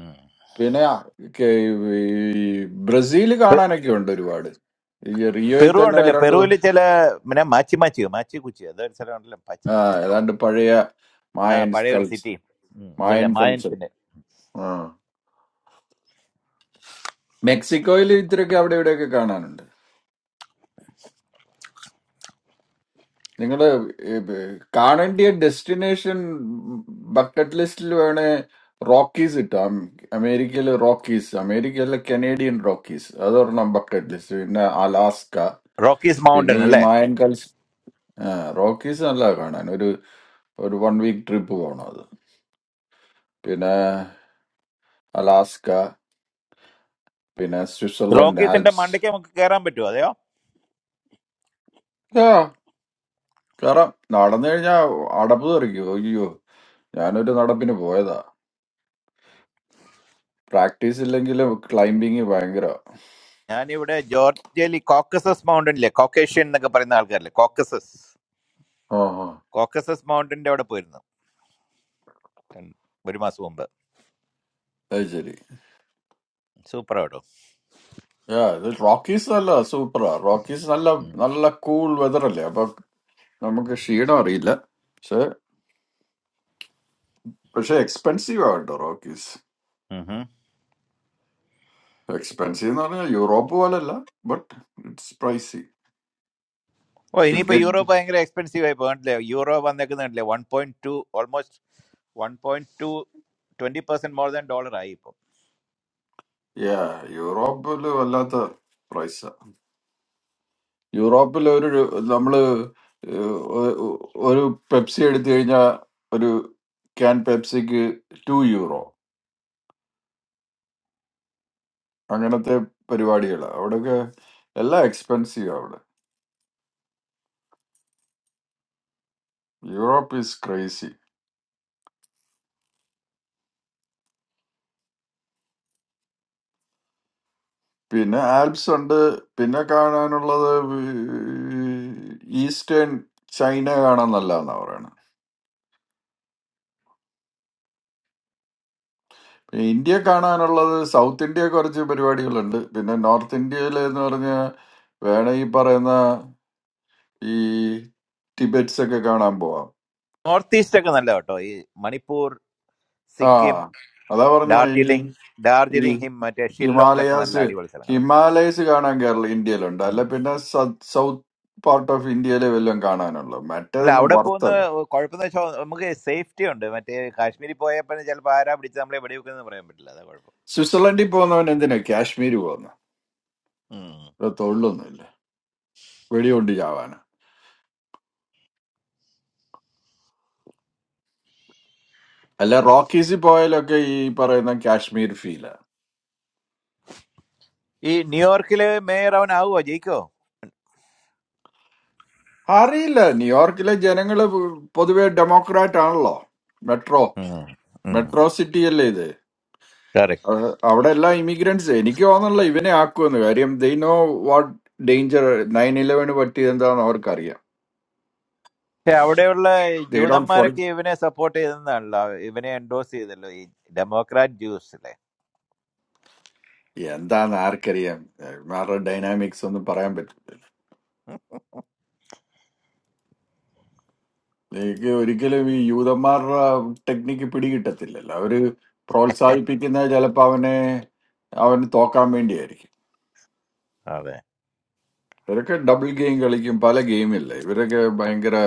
Speaker 21: ഉം.
Speaker 14: പിന്നെ ആ, കെ- ഈ ബ്രസീൽ
Speaker 21: പെ-
Speaker 14: കാണാനൊക്കെ ഉണ്ട് ഒരുപാട് ഈ റിയോയിൽ
Speaker 21: പെറു
Speaker 14: തന്നെ
Speaker 21: ഉണ്ടല്ലോ
Speaker 14: രണ്ട്
Speaker 21: പെറുവിൽ ചില പിന്നെ മാച്ചി മാച്ചിയോ മാച്ചി കുച്ചി അതൊരു സ്ഥലം ഉണ്ടല്ലോ മാച്ചി
Speaker 14: ആ, ഏതാണ്ട് പഴയ
Speaker 21: ആ
Speaker 14: മായൻ
Speaker 21: പഴയ ഒരു
Speaker 14: സ്കൾപ്സ്
Speaker 21: സിറ്റി ഇവരുടെ
Speaker 14: മായൻ കൾച്ചർ
Speaker 21: മായൻസിന്റെ
Speaker 14: മെക്സിക്കോയിൽ ഇത്രയൊക്കെ അവിടെ ഇവിടെയൊക്കെ കാണാനുണ്ട് നിങ്ങള് കാണേണ്ടിയ ഡെസ്റ്റിനേഷൻ ബക്കറ്റ് ലിസ്റ്റിൽ വേണേ റോക്കീസ് ഇട്ടാം അമേരിക്കയിലെ റോക്കീസ് അമേരിക്കയിലെ കനേഡിയൻ റോക്കീസ് അതൊരെണ്ണം ബക്കറ്റ് ലിസ്റ്റ് പിന്നെ അലാസ്ക
Speaker 21: റോക്കീസ്
Speaker 14: പിന്നെ
Speaker 21: മൗണ്ടൻ
Speaker 14: ഈ
Speaker 21: അല്ലേ
Speaker 14: മായൻ കൽസ് ആ, റോക്കീസ് നല്ല കാണാൻ ഒരു ഒരു വൺ വീക്ക് ട്രിപ്പ് പോകണം അത് പിന്നെ അലാസ്ക പിന്നെ സ്വിറ്റ്സർലൻഡ്
Speaker 21: റോക്കീസിന്റെ
Speaker 14: ആൽപ്സ്
Speaker 21: മണ്ടയ്ക്ക് നമുക്ക് കയറാൻ പറ്റുമോ അതെയോ
Speaker 14: ആ കയറാം നടന്നു കഴിഞ്ഞാൽ അടപ്പ് തെറിക്കും അയ്യോ ഞാനൊരു നടപ്പിന് പോയതാ പ്രാക്ടീസ് ഇല്ലെങ്കിലും ക്ലൈംബിങ് ഭയങ്കര
Speaker 21: ഞാനിവിടെ ജോർജിയയിൽ ഈ കോക്കസസ് മൗണ്ടനിലെ കോക്കേഷ്യൻ എന്നൊക്കെ പറയുന്ന ആൾക്കാരില്ലേ കോക്കസസ്
Speaker 14: ആ ആ
Speaker 21: കോക്കസസ് മൗണ്ടന്റെ അവിടെ പോയിരുന്നു കൺ- ഒരു മാസം മുമ്പ്
Speaker 14: അത് ശരി
Speaker 21: സൂപ്പർ ആട്ടോ
Speaker 14: ആ ഇത് റോക്കീസ് നല്ല സൂപ്പറാ റോക്കീസ് നല്ല
Speaker 21: ഉം.
Speaker 14: നല്ല കൂൾ വെതർ അല്ലേ അപ്പൊ നമുക്ക് ക്ഷീണം അറിയില്ല പക്ഷെ പക്ഷെ എക്സ്പെൻസീവ് ആ കേട്ടോ റോക്കീസ്
Speaker 21: ഉഹും.
Speaker 14: എക്സ്പെൻസീവ് എന്ന് പറഞ്ഞാൽ യൂറോപ്പ് പോലല്ല but it's pricey
Speaker 21: oh
Speaker 14: too
Speaker 21: ഇനിയിപ്പോ യൂറോ
Speaker 14: ഗെറ്റ്
Speaker 21: ഭയങ്കര എക്സ്പെൻസീവ് ആയി പോകണ്ടല്ലേ യൂറോ വന്നേക്കുന്നില്ലേ one point two almost one point two twenty percent more than dollar ആയി ഇപ്പൊ
Speaker 14: യാ യൂറോപ്പിൽ വല്ലാത്ത പ്രൈസാ യൂറോപ്പിൽ ഒരു രു- നമ്മള് ഏഹ്, ഒ- ഒ- ഒരു പെപ്സി എടുത്തു കഴിഞ്ഞാൽ ഒരു ക്യാൻ പെപ്സിക്ക് ടു യൂറോ അങ്ങനത്തെ പരിപാടികൾ അവിടെയൊക്കെ എല്ലാം എക്സ്പെൻസീവ് അവിടെ യൂറോപ്പ് ഈസ് ക്രൈസി പിന്നെ ആൽപ്സ് ഉണ്ട് പിന്നെ കാണാനുള്ളത് ഈ ഈസ്റ്റേൺ ചൈന കാണാൻ നല്ലതെന്നാ പറയണത് പിന്നെ ഇന്ത്യ കാണാനുള്ളത് സൗത്ത് ഇന്ത്യ കുറച്ച് പരിപാടികളുണ്ട് പിന്നെ നോർത്ത് ഇന്ത്യയിൽ എന്ന് പറഞ്ഞാൽ വേണേ ഈ പറയുന്ന ഈ ടിബറ്റ്സ് ഒക്കെ കാണാൻ പോവാം
Speaker 21: നോർത്ത് ഈസ്റ്റ് ഒക്കെ നല്ല കേട്ടോ ഈ മണിപ്പൂർ
Speaker 14: ആ
Speaker 21: സിക്കിം
Speaker 14: അതാ പറഞ്ഞ
Speaker 21: ഡാർജിലിംഗ്
Speaker 14: ഈ
Speaker 21: ഡാർജിലിംഗ് ഹിം മറ്റേ ഷില്ലോങ് ഒക്കെ
Speaker 14: ഹിമാലയാസ്
Speaker 21: നല്ല അടിപൊളി
Speaker 14: ഹിമാലയസ് കാണാൻ കേരള ഇന്ത്യയിലുണ്ട് അല്ല
Speaker 21: സ്ഥലങ്ങളാണ്
Speaker 14: പിന്നെ സൗത്ത് പാർട്ട് ഓഫ് ഇന്ത്യയിലെ വല്ലതും കാണാനുള്ളു
Speaker 21: അല്ല
Speaker 14: മറ്റേതൊന്നും
Speaker 21: അവിടെ പോകുന്ന
Speaker 14: വറുത്തല്ല
Speaker 21: കുഴപ്പമെന്ന് വെച്ചാൽ നമുക്ക് സേഫ്റ്റി ഉണ്ട് മറ്റേ കാശ്മീരിൽ പോയപ്പോൾ ചിലപ്പോൾ ആരാ പിടിച്ച് നമ്മളെ വെടി വെക്കുന്നത് പറയാൻ പറ്റില്ല അതാ കുഴപ്പം
Speaker 14: സ്വിറ്റ്സർലൻഡിൽ പോകുന്നവൻ എന്തിനാ കാശ്മീർ പോകുന്ന
Speaker 21: ഉം.
Speaker 14: ഇവിടെ തൊഴിലൊന്നുമില്ല വെടികൊണ്ട് ചാവാന് അല്ല റോക്കീസിൽ പോയാലൊക്കെ ഈ പറയുന്ന കാശ്മീർ ഫീലാണ്
Speaker 21: ഈ ന്യൂയോർക്കില് മേയർ അവൻ ആവുമോ ജയിക്കോ
Speaker 14: അറിയില്ല ന്യൂയോർക്കിലെ ജനങ്ങള് പൊതുവെ ഡെമോക്രാറ്റ് ആണല്ലോ മെട്രോ മെട്രോ സിറ്റി അല്ലേ ഇത്
Speaker 21: കറക്റ്റ്
Speaker 14: അവിടെ അവിടെ എല്ലാം ഇമിഗ്രൻസ് എനിക്ക് തോന്നുന്നില്ല ഇവനെ ആക്കുമെന്ന് കാര്യം they know what danger nine ഇലവന് പറ്റിയത് എന്താണെന്ന് അവർക്കറിയാം
Speaker 21: അവിടെയുള്ള
Speaker 14: ദൈ ഡോണ്ട് ഫോർ
Speaker 21: ജൂതന്മാരൊക്കെ ഇവനെ സപ്പോർട്ട് ചെയ്തെന്നാണല്ലോ ഇവനെ എൻഡോസ് ചെയ്തല്ലോ ഈ ഡെമോക്രാറ്റ് ജ്യൂസ് അല്ലേ
Speaker 14: എന്താന്ന് ആർക്കറിയാം ഇവന്മാരുടെ ഡൈനാമിക്സ് ഒന്നും പറയാൻ പറ്റില്ല എനിക്ക് ഒരിക്കലും ഈ യൂതന്മാരുടെ ടെക്നിക്ക് പിടികിട്ടത്തില്ലല്ലോ അവര് പ്രോത്സാഹിപ്പിക്കുന്ന ചിലപ്പോൾ അവനെ അവന് തോക്കാൻ വേണ്ടിയായിരിക്കും
Speaker 21: അതെ
Speaker 14: ഇവരൊക്കെ ഡബിൾ ഗെയിം കളിക്കും പല ഗെയിമില്ല ഇവരൊക്കെ ഭയങ്കര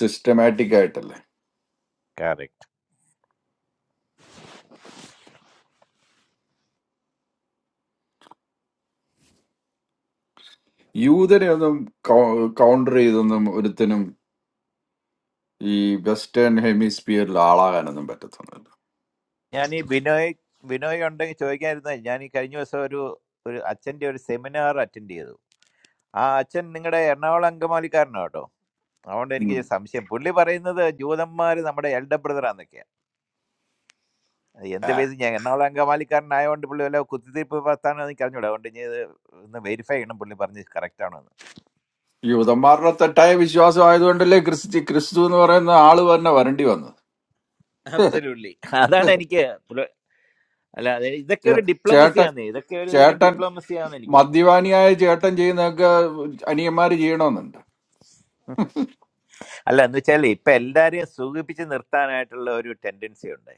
Speaker 14: സിസ്റ്റമാറ്റിക് ആയിട്ടല്ലേ
Speaker 21: കറക്റ്റ്
Speaker 14: യൂതനെ ഒന്നും കൗണ്ടർ ചെയ്തൊന്നും ഒരുത്തിനും ഈ വെസ്റ്റേൺ ഹെമിസ്ഫിയറിൽ ആളാകാനൊന്നും പറ്റത്തൊന്നുമില്ല
Speaker 21: ഞാൻ ഈ ബിനോയ് ബിനോയ് ഉണ്ടെങ്കിൽ ചോദിക്കാതിരുന്ന ഞാൻ ഈ കഴിഞ്ഞ ദിവസം ഒരു ഒരു അച്ഛന്റെ ഒരു സെമിനാർ അറ്റൻഡ് ചെയ്തു ആ അച്ഛൻ നിങ്ങളുടെ എറണാകുളം അങ്കമാലിക്കാരനാണ് കേട്ടോ അതുകൊണ്ട് എനിക്ക്
Speaker 14: ഉം.
Speaker 21: സംശയം പുള്ളി പറയുന്നത് ജൂതന്മാർ നമ്മുടെ എൽഡർ ബ്രദറാന്നൊക്കെയാണ് എന്ത്
Speaker 14: ആ,
Speaker 21: ബേസ് ഞാൻ എറണാകുളം അങ്കമാലിക്കാരനായതുകൊണ്ട് പുള്ളി വല്ല കുത്തിത്തിരിപ്പ് പത്താണെന്ന് എനിക്ക് അറിഞ്ഞൂടാ അതുകൊണ്ട് ഇനി ഇത് ഒന്ന് വെരിഫൈ ചെയ്യണം പുള്ളി പറഞ്ഞ് കറക്റ്റ് ആണോ എന്ന്
Speaker 14: യൂതന്മാരുടെ തെറ്റായ വിശ്വാസം ആയതുകൊണ്ടല്ലേ ക്രിസ്തു ക്രിസ്തു എന്ന് പറയുന്ന ആള് തന്നെ വരണ്ടി വന്നത്
Speaker 21: അബ്സല്യൂട്ട്ലി അതാണ് എനിക്ക് പുള്ള- അല്ല അത് ഇതൊക്കെ ഒരു
Speaker 14: ചേ-
Speaker 21: ഡിപ്ലോമസി
Speaker 14: ചേട്ടൻ
Speaker 21: ആണ് ഇതൊക്കെ ഒരു തരം
Speaker 14: ചേട്ടൻ
Speaker 21: ഡിപ്ലോമസി ആണെന്ന് എനിക്ക് തോന്നുന്നത്
Speaker 14: മദ്യപാനിയായ ചേട്ടൻ ചെയ്യുന്നതൊക്കെ അനിയന്മാര് ചെയ്യണമെന്നുണ്ട്
Speaker 21: അല്ല എന്ന് വെച്ചാൽ ഇപ്പൊ എല്ലാരെയും സുഖിപ്പിച്ച് നിർത്താനായിട്ടുള്ള ഒരു ടെൻഡൻസി ഉണ്ട്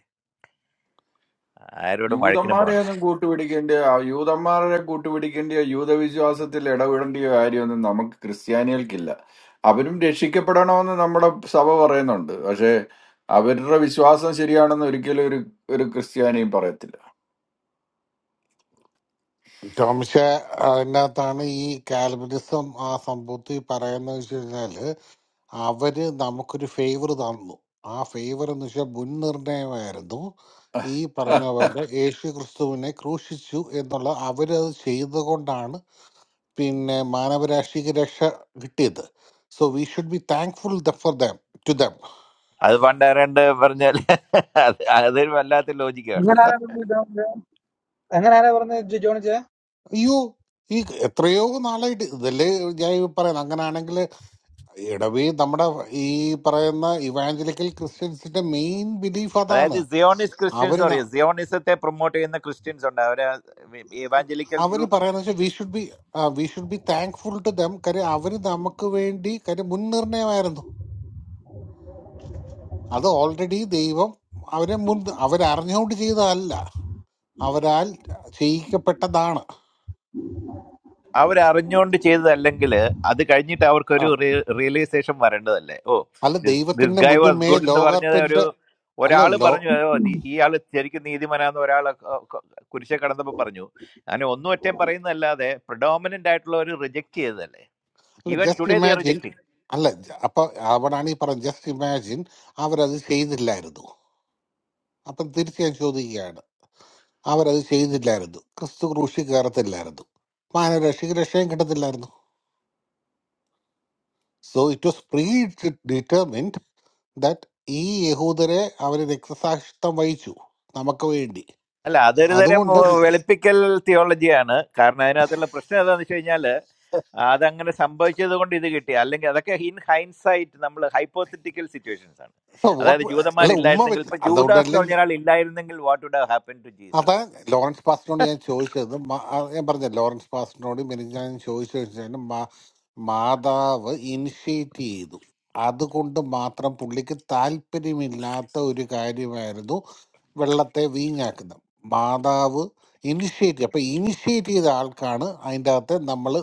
Speaker 21: ആരോടും വഴക്കിനും
Speaker 14: യൂതന്മാരെ
Speaker 21: പോകണ്ട
Speaker 14: ഒന്നും കൂട്ടുപിടിക്കേണ്ടിയോ ആ യൂതന്മാരെ കൂട്ടുപിടിക്കേണ്ടിയോ യൂതവിശ്വാസത്തിൽ ഇടപെടേണ്ടിയോ കാര്യമൊന്നും നമുക്ക് ക്രിസ്ത്യാനികൾക്കില്ല അവരും രക്ഷിക്കപ്പെടണമെന്ന് നമ്മുടെ സഭ പറയുന്നുണ്ട് പക്ഷേ അവരുടെ വിശ്വാസം ശരിയാണെന്ന് ഒരിക്കലും ഒരു ഒരു ക്രിസ്ത്യാനിയും പറയത്തില്ല
Speaker 11: പക്ഷെ അതിനകത്താണ് ഈ കാൽവിനിസം ആ സംഭവത്തിൽ പറയുന്നത് വെച്ച് കഴിഞ്ഞാല് അവര് നമുക്കൊരു ഫേവർ തന്നു ആ ഫേവർ എന്ന് വെച്ചാൽ മുൻനിർണയമായിരുന്നു ഈ പറഞ്ഞ പോലെ യേശു ക്രിസ്തുവിനെ ക്രൂശിച്ചു എന്നുള്ള അവരത് ചെയ്തുകൊണ്ടാണ് പിന്നെ മാനവരാശിക്ക് രക്ഷ കിട്ടിയത് so we should be thankful for them to them
Speaker 21: അത് പണ്ട് ആരാണ്ട് പറഞ്ഞാൽ അത് അതൊരു വല്ലാത്ത ലോജിക്കാണ്
Speaker 24: എങ്ങനെ ആരാ പറഞ്ഞത് എങ്ങനെ ആരാ പറഞ്ഞത് ജോ- ജോണിച്ചേ
Speaker 11: അയ്യോ ഈ എത്രയോ നാളായിട്ട് ഇതല്ലേ ഞാൻ ഈ പറയുന്നത് അങ്ങനാണെങ്കിൽ എടവി നമ്മുടെ ഈ പറയുന്ന ഇവാഞ്ചലിക്കൽ ക്രിസ്ത്യൻസിന്റെ മെയിൻ ബിലീഫ് അതാണ്
Speaker 21: അതായത് സിയോണിസ്റ്റ് ക്രിസ്ത്യൻസ്
Speaker 11: അവര് ന-
Speaker 21: പറയും സിയോണിസത്തെ പ്രൊമോട്ട് ചെയ്യുന്ന ക്രിസ്ത്യൻസ് ഉണ്ട് അവര് ഇവാഞ്ചലിക്കൽ
Speaker 11: അവര്
Speaker 21: ഗ്രൂപ്പ്
Speaker 11: പറയുന്ന വെച്ചാൽ we should be we should be thankful to them കാര്യം അവര് നമുക്ക് വേണ്ടി കാര്യം മുൻനിർണയമായിരുന്നു അത് ഓൾറെഡി ദൈവം അവരെ മുൻ അവരറിഞ്ഞുകൊണ്ട് ചെയ്തതല്ല അവരാൽ ചെയ്യിക്കപ്പെട്ടതാണ്
Speaker 21: അവർ അറിഞ്ഞുകൊണ്ട് ചെയ്തതല്ലെങ്കിൽ അത് കഴിഞ്ഞിട്ട്
Speaker 11: ആ.
Speaker 21: അവർക്കൊരു റിയലൈസേഷൻ വരേണ്ടതല്ലേ ഓ
Speaker 11: അല്ല
Speaker 21: ദിസ്
Speaker 11: ദൈവത്തിന്റെ
Speaker 21: ഗൈ വാസ്
Speaker 11: മുന്നുമേ
Speaker 21: ഗുഡ് എന്ന് പറഞ്ഞത് ഒരു
Speaker 11: ലോകത്തിന്റെ അല്ല
Speaker 21: ഒരാൾ
Speaker 11: ലോ
Speaker 21: പറഞ്ഞു ഓ ദി- ഈ ആള് ശരിക്കും നീതിമാനാന്ന് ഒരാൾ കുരിശെ കടന്നപ്പോൾ പറഞ്ഞു അങ്ങനെ ഒന്നും ഒറ്റയും പറയുന്നതല്ലാതെ പ്രഡോമിനന്റ് ആയിട്ടുള്ള ഒരു റിജക്ട് ചെയ്തതല്ലേ
Speaker 11: അല്ല
Speaker 21: even
Speaker 11: just
Speaker 21: today they are
Speaker 11: imagine
Speaker 21: rejecting
Speaker 11: അല്ല ജ- അപ്പൊ അവിടാണ് ഈ പറഞ്ഞ ജസ്റ്റ് ഇമാജിൻ അവരത് ചെയ്തില്ലായിരുന്നു അപ്പം തീർച്ചയായും ചോദിക്കുകയാണ് അവരത് ചെയ്തില്ലായിരുന്നു ക്രിസ്തു ക്രൂശി കയറത്തില്ലായിരുന്നു മാനരക്ഷയ്ക്ക് രക്ഷയും കിട്ടത്തില്ലായിരുന്നു so it was predetermined that ഈ യഹൂദരെ അവർ രക്തസാക്ഷിത്വം വഹിച്ചു നമുക്ക് വേണ്ടി
Speaker 21: അല്ല അതൊരു തരം
Speaker 11: അതുകൊണ്ട്
Speaker 21: ഉം, വെളുപ്പിക്കൽ തിയോളജിയാണ് കാരണം അതിനകത്തുള്ള പ്രശ്നം എന്താണെന്ന് വെച്ച് കഴിഞ്ഞാൽ അതങ്ങനെ സംഭവിച്ചത് കൊണ്ട് ഇത് കിട്ടി അല്ലെങ്കിൽ അതൊക്കെ ഇൻ ഹൈൻസൈറ്റ് നമ്മൾ ഹൈപ്പോത്തറ്റിക്കൽ സിറ്റുവേഷൻസ് ആണ് അതായത്
Speaker 11: വാട്ട് അല്ല ഉമ്മ
Speaker 21: ജൂതന്മാരില്ലായിരുന്നെങ്കിൽ
Speaker 11: വെച്ച്
Speaker 21: ഇപ്പൊ ജൂദാസ് എന്ന്
Speaker 11: അതുകൊണ്ടല്ലേ
Speaker 21: പറഞ്ഞ ഒരാൾ ഇല്ലായിരുന്നെങ്കിൽ വാട്ട് വുഡ് ഹാപ്പൻ ടു
Speaker 11: അതാ
Speaker 21: ജീസസ്
Speaker 11: ലോറൻസ് പാസ്റ്ററിനോട് ഞാൻ ചോദിച്ചത് മ- ആ, ഞാൻ പറഞ്ഞ ലോറൻസ് പാസ്റ്ററിനോട് മിനി ഞാൻ ചോദിച്ചു മാതാവ് ഇനിഷ്യേറ്റ് ചെയ്തു അതുകൊണ്ട് മാത്രം പുള്ളിക്ക് താല്പര്യമില്ലാത്ത ഒരു കാര്യമായിരുന്നു വെള്ളത്തെ വീഞ്ഞാക്കുന്നത് മാതാവ് ഇനിഷ്യേറ്റ് അപ്പം ഇനിഷ്യേറ്റ് ചെയ്ത ആൾക്കാണ് അതിൻ്റെ അകത്ത് നമ്മൾ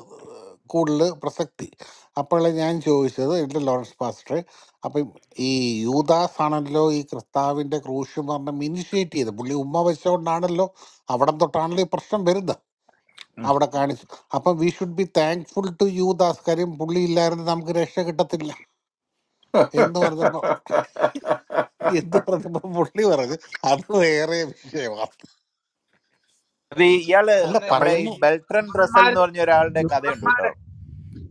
Speaker 11: കൂടുതൽ പ്രസക്തി അപ്പോഴാണ് ഞാൻ ചോദിച്ചത് എൻ്റെ ലോറൻസ് പാസ്റ്ററെ അപ്പം ഈ യൂദാസ് ആണല്ലോ ഈ ക്രിസ്താവിന്റെ ക്രൂശ് പറഞ്ഞ ഇനിഷ്യേറ്റ് ചെയ്ത് പുള്ളി ഉമ്മ വെച്ചുകൊണ്ടാണല്ലോ അവിടെ തൊട്ടാണല്ലോ ഈ പ്രശ്നം വരുന്നത് അവിടെ കാണിച്ചു അപ്പം we should be thankful to യൂദാസ് കാര്യം പുള്ളി ഇല്ലായിരുന്നു നമുക്ക് രക്ഷ കിട്ടത്തില്ല എന്ന് പറഞ്ഞപ്പോ എന്ത് പറഞ്ഞപ്പോ പുള്ളി പറഞ്ഞു അത് വേറെ വിഷയമാണ്
Speaker 21: അത് ഈ- ഇയാള്
Speaker 11: അല്ല
Speaker 24: അല്ലെന്നേ
Speaker 21: നമ്മുടെ
Speaker 24: അപ്പൊ
Speaker 21: ഈ
Speaker 11: പറയുന്നു
Speaker 24: ഈ-
Speaker 21: ബെൽട്രൻ ഡ്രസൽ
Speaker 24: ഇവന്മാര്
Speaker 21: എന്ന് പറഞ്ഞ ഒരാളുടെ കഥയുണ്ട് കേട്ടോ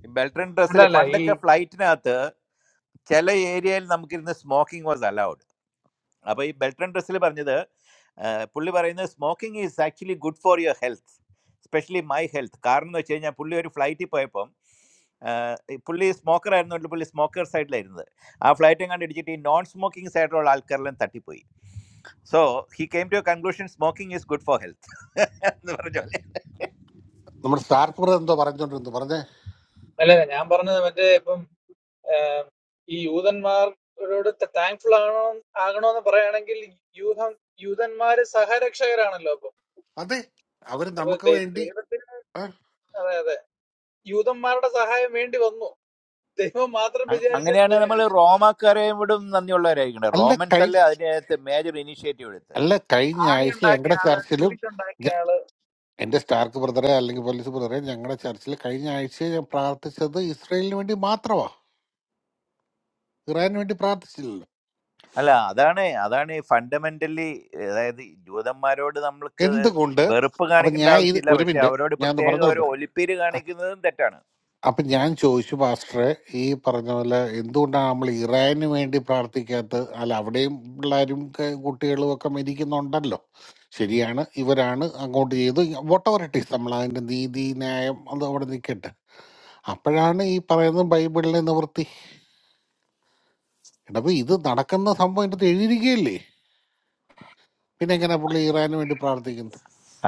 Speaker 21: ഈ ബെൽട്രൻ
Speaker 24: അല്ല
Speaker 21: ഡ്രസ്സൽ
Speaker 24: അല്ല ഈ
Speaker 21: പണ്ടൊക്കെ ഫ്ലൈറ്റിനകത്ത് ചില ഏരിയയിൽ നമുക്കിരുന്ന് സ്മോക്കിംഗ് വാസ് അലൗഡ് അപ്പോൾ ഈ ബെൽട്രൻ ഡ്രസ്സിൽ പറഞ്ഞത് ആ, പുള്ളി പറയുന്നത് smoking is actually good for your health specially my health കാരണം എന്ന് വെച്ച് കഴിഞ്ഞാൽ പുള്ളി ഒരു ഫ്ലൈറ്റിൽ പോയപ്പം ആ, ഈ പുള്ളി സ്മോക്കർ ആയിരുന്നുകൊണ്ട് പുള്ളി സ്മോക്കർ സൈഡിലായിരുന്നത് ആ ഫ്ലൈറ്റും കണ്ട് ഇടിച്ചിട്ട് ഈ നോൺ സ്മോക്കിംഗ് സൈഡിലുള്ള ആൾക്കാരെല്ലാം തട്ടിപ്പോയി so he came to a conclusion smoking is good for health എന്ന് പറഞ്ഞ പോലെ
Speaker 11: നമ്മുടെ സ്റ്റാർപ്പൂർ എന്തോ പറഞ്ഞോണ്ടിരുന്നു പറഞ്ഞേ
Speaker 24: അല്ല അല്ല, ഞാൻ പറഞ്ഞത് മറ്റേ ഇപ്പം ഈ യൂതന്മാരോട് താങ്ക്ഫുൾ ആണോ ആകണോന്ന് പറയുകയാണെങ്കിൽ യൂഹം യൂതന്മാര് സഹരക്ഷകരാണല്ലോ അപ്പൊ
Speaker 11: അതെ അവര്
Speaker 24: അപ്പൊ
Speaker 11: നമുക്ക്
Speaker 24: ദൈ-
Speaker 11: വേണ്ടി
Speaker 24: ദൈവത്തിന്
Speaker 11: ആ,
Speaker 24: അതെ അതെ യൂതന്മാരുടെ സഹായം വേണ്ടി വന്നു ദൈവം മാത്രം
Speaker 21: അ-
Speaker 24: വിചാരിച്ചാൽ
Speaker 21: അങ്ങനെയാണ്
Speaker 24: പോരെ
Speaker 21: നമ്മൾ റോമാക്കാരെയും വിടും നന്ദിയുള്ളവരായിരിക്കണം
Speaker 11: അല്ല
Speaker 21: റോമൻസ്
Speaker 11: കഴി
Speaker 21: അല്ലേ അതിനകത്ത് മേജർ ഇനിഷ്യേറ്റീവ് എടുത്ത്
Speaker 11: അല്ല കഴിഞ്ഞ
Speaker 24: ആണി
Speaker 11: ആഴ്ച
Speaker 24: ഉണ്ടാക്കിയ
Speaker 11: ഞങ്ങളുടെ
Speaker 24: ആള്
Speaker 11: ചർച്ചിലും
Speaker 24: കുരിക്കുണ്ടാക്കിയ ആള്
Speaker 11: എൻ്റെ സ്റ്റാർക്ക് ബ്രദറെ അല്ലെങ്കിൽ പോലീസ് ബ്രദറെ ഞങ്ങളുടെ ചർച്ചിൽ കഴിഞ്ഞ ആഴ്ച ഞാൻ പ്രാർത്ഥിച്ചത് ഇസ്രയേലിന് വേണ്ടി മാത്രമാ ഇറാനു വേണ്ടി പ്രാർത്ഥിച്ചില്ലല്ലോ
Speaker 21: അല്ല അതാണ് അതാണ് ഫണ്ടമെന്റലി അതായത് ജൂതന്മാരോട് നമ്മൾക്ക്
Speaker 11: എന്തുകൊണ്ട്
Speaker 21: വെറുപ്പ്
Speaker 11: അപ്പൊ
Speaker 21: കാണിക്കേണ്ട
Speaker 11: ഞാൻ ഇത്
Speaker 21: ആവശ്യമില്ല
Speaker 11: ഒരു
Speaker 21: പക്ഷെ
Speaker 11: മിനിറ്റ്
Speaker 21: അവരോട്
Speaker 11: ഞാൻ ഒന്ന്
Speaker 21: പ്രത്യേക ഒരു
Speaker 11: പറഞ്ഞോട്ടെ
Speaker 21: ഒലിപ്പേര് കാണിക്കുന്നതും തെറ്റാണ്
Speaker 11: അപ്പൊ ഞാൻ ചോദിച്ചു പാസ്റ്ററെ ഈ പറഞ്ഞ പോലെ എന്തുകൊണ്ടാണ് നമ്മൾ ഇറാനു വേണ്ടി പ്രാർത്ഥിക്കാത്തത് അല്ല അവിടെയും പിള്ളേരും ക- കുട്ടികളും ഒക്കെ മരിക്കുന്നുണ്ടല്ലോ ശരിയാണ് ഇവരാണ് അങ്ങോട്ട് ചെയ്തു വോട്ടവർ ഇട്ടീസ് നമ്മൾ അതിന്റെ നീതി ന്യായം അത് അവിടെ നിൽക്കട്ടെ അപ്പോഴാണ് ഈ പറയുന്നത് ബൈബിളിലെ നിവൃത്തി എടാ അപ്പൊ ഇത് നടക്കുന്ന സംഭവം എൻ്റെ അടുത്ത് എഴുതിയിരിക്കുകയല്ലേ പിന്നെ എങ്ങനെ പുള്ളി ഇറാനു വേണ്ടി പ്രാർത്ഥിക്കുന്നത്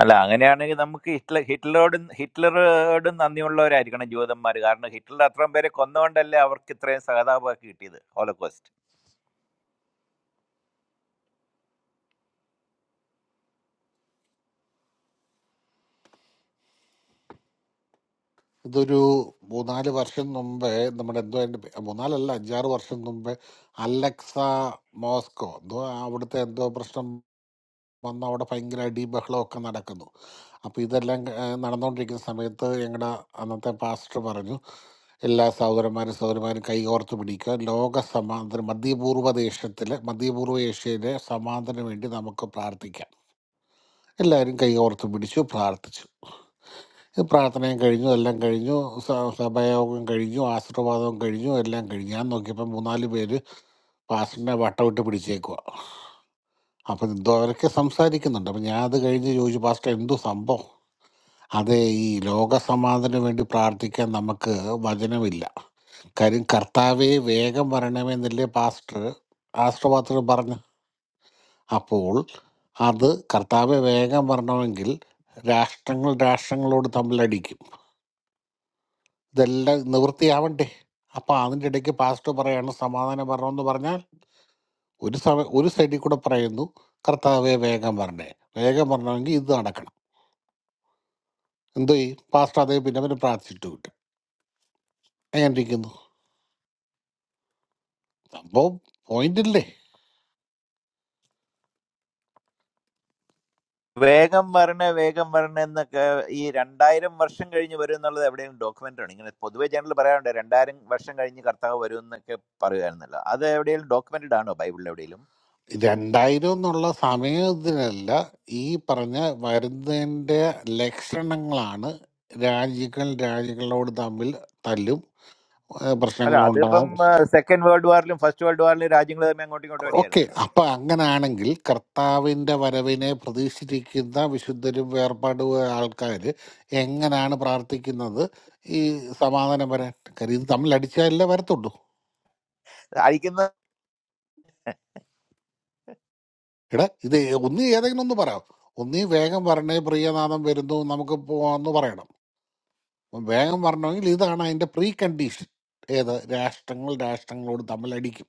Speaker 21: അല്ല അങ്ങനെയാണെങ്കിൽ നമുക്ക് ഹിറ്റ്ലർ ഹിറ്റ്ലറോടും ഹിറ്റ്ലറോടും നന്ദിയുള്ളവരായിരിക്കണം ജൂതന്മാർ കാരണം ഹിറ്റ്ലർ അത്രയും പേരെ കൊന്നുകൊണ്ടല്ലേ അവർക്ക് ഇത്രയും സഹതാപമൊക്കെ കിട്ടിയത് ഹോളോകോസ്റ്റ്
Speaker 11: ഇതൊരു മൂന്നാല് വർഷം മുമ്പേ നമ്മുടെ എന്തോ അതിന്റെ പേ- മൂന്നാലല്ല അഞ്ചാറ് വർഷം മുമ്പേ അലക്സ മോസ്കോ എന്തോ അവിടുത്തെ എന്തോ പ്രശ്നം വന്ന് അവിടെ ഭയങ്കര അടി ബഹളമൊക്കെ നടക്കുന്നു അപ്പോൾ ഇതെല്ലാം ഏഹ്, നടന്നുകൊണ്ടിരിക്കുന്ന സമയത്ത് ഞങ്ങളുടെ അന്നത്തെ പാസ്റ്റർ പറഞ്ഞു എല്ലാ സഹോദരന്മാരും സഹോദരന്മാരും കൈകോർത്ത് പിടിക്കുക ലോക സമാന്തരം മധ്യപൂർവ്വ ദേശത്തിലെ മധ്യപൂർവ്വ ഏഷ്യയിലെ സമാന്തരം വേണ്ടി നമുക്ക് പ്രാർത്ഥിക്കാം എല്ലാവരും കൈകോർത്ത് പിടിച്ചു പ്രാർത്ഥിച്ചു ഇത് പ്രാർത്ഥനയും കഴിഞ്ഞു എല്ലാം കഴിഞ്ഞു സ- സഭായോഗം കഴിഞ്ഞു ആശീർവാദവും കഴിഞ്ഞു എല്ലാം കഴിഞ്ഞു ഞാൻ നോക്കിയപ്പോൾ മൂന്നാല് പേര് പാസ്റ്ററിനെ വട്ടമിട്ട് പിടിച്ചേക്കുക അപ്പം എന്തോ അവരൊക്കെ സംസാരിക്കുന്നുണ്ട് അപ്പം ഞാൻ അത് കഴിഞ്ഞ് ചോദിച്ചു പാസ്റ്റർ എന്തോ സംഭവം അതെ ഈ ലോകസമാധാനം വേണ്ടി പ്രാർത്ഥിക്കാൻ നമുക്ക് വചനമില്ല കാര്യം കർത്താവെ വേഗം വരണമെന്നല്ലേ പാസ്റ്റർ ആശ്രവാദത്തിൽ പറഞ്ഞു അപ്പോൾ അത് കർത്താവെ വേഗം വരണമെങ്കിൽ രാഷ്ട്രങ്ങൾ രാഷ്ട്രങ്ങളോട് തമ്മിലടിക്കും ഇതെല്ലാം നിവൃത്തിയാവണ്ടേ അപ്പം അതിൻ്റെ ഇടയ്ക്ക് പാസ്റ്റർ പറയാണ് സമാധാനം വരണമെന്ന് പറഞ്ഞാൽ ഒരു സമ ഒരു സൈഡിൽ കൂടെ പറയുന്നു കർത്താവെ വേഗം വരണേ വേഗം വരണമെങ്കിൽ ഇത് നടക്കണം എന്തോ ഈ പാസ്റ്റർ അതേ പിന്നെ അവന് പ്രാർത്ഥിച്ചിട്ട് കിട്ടും എങ്ങനെ ഇരിക്കുന്നു സംഭവം പോയിന്റ് ഇല്ലേ
Speaker 21: വേഗം വരണേ വേഗം വരണേ എന്നൊക്കെ ഈ രണ്ടായിരം വർഷം കഴിഞ്ഞ് വരും എന്നുള്ളത് എവിടെയും document ആണ് ഇങ്ങനെ പൊതുവെ ജനറൽ പറയാറുണ്ട് രണ്ടായിരം വർഷം കഴിഞ്ഞ് കർത്താവ് വരും എന്നൊക്കെ പറയുമായിരുന്നല്ലോ അത് എവിടെയെങ്കിലും ഡോക്യുമെന്റഡ് ആണോ ബൈബിളിൽ എവിടെയെങ്കിലും
Speaker 11: രണ്ടായിരം എന്നുള്ള സമയത്തിനല്ല ഈ പറഞ്ഞ വരുന്നതിൻ്റെ ലക്ഷണങ്ങളാണ് രാജ്യങ്ങൾ രാജ്യങ്ങളോട് തമ്മിൽ തല്ലും ഏഹ്
Speaker 21: അല്ല അതിപ്പം
Speaker 11: പ്രശ്നങ്ങളുണ്ടാകും
Speaker 21: സെക്കൻഡ് വേൾഡ് വാറിലും ഫസ്റ്റ് വേൾഡ് വാറിലും രാജ്യങ്ങൾ തമ്മിൽ അങ്ങോട്ടും ഇങ്ങോട്ടും
Speaker 11: ഓക്കെ
Speaker 21: അടിയായിരുന്നല്ലോ
Speaker 11: അപ്പൊ അങ്ങനാണെങ്കിൽ കർത്താവിന്റെ വരവിനെ പ്രതീക്ഷിച്ചിരിക്കുന്ന വിശുദ്ധരും വേർപാട് ആൾക്കാർ എങ്ങനെയാണ് പ്രാർത്ഥിക്കുന്നത് ഈ സമാധാനം വരാൻ കാര്യം ഇത് തമ്മിൽ അടിച്ചാലേ വരത്തുള്ളൂ
Speaker 21: അടിക്കുന്ന
Speaker 11: എടാ ഇത് ഒന്നീ ഏതെങ്കിലും ഒന്ന് പറയാം ഒന്നീ വേഗം വരണേ പ്രിയനാഥം വരുന്നു നമുക്ക് പോവാന്ന് പറയണം അപ്പം വേഗം വരണമെങ്കിൽ ഇതാണ് അതിന്റെ പ്രീ കണ്ടീഷൻ ഏത് രാഷ്ട്രങ്ങൾ രാഷ്ട്രങ്ങളോട് തമ്മിൽ അടിക്കും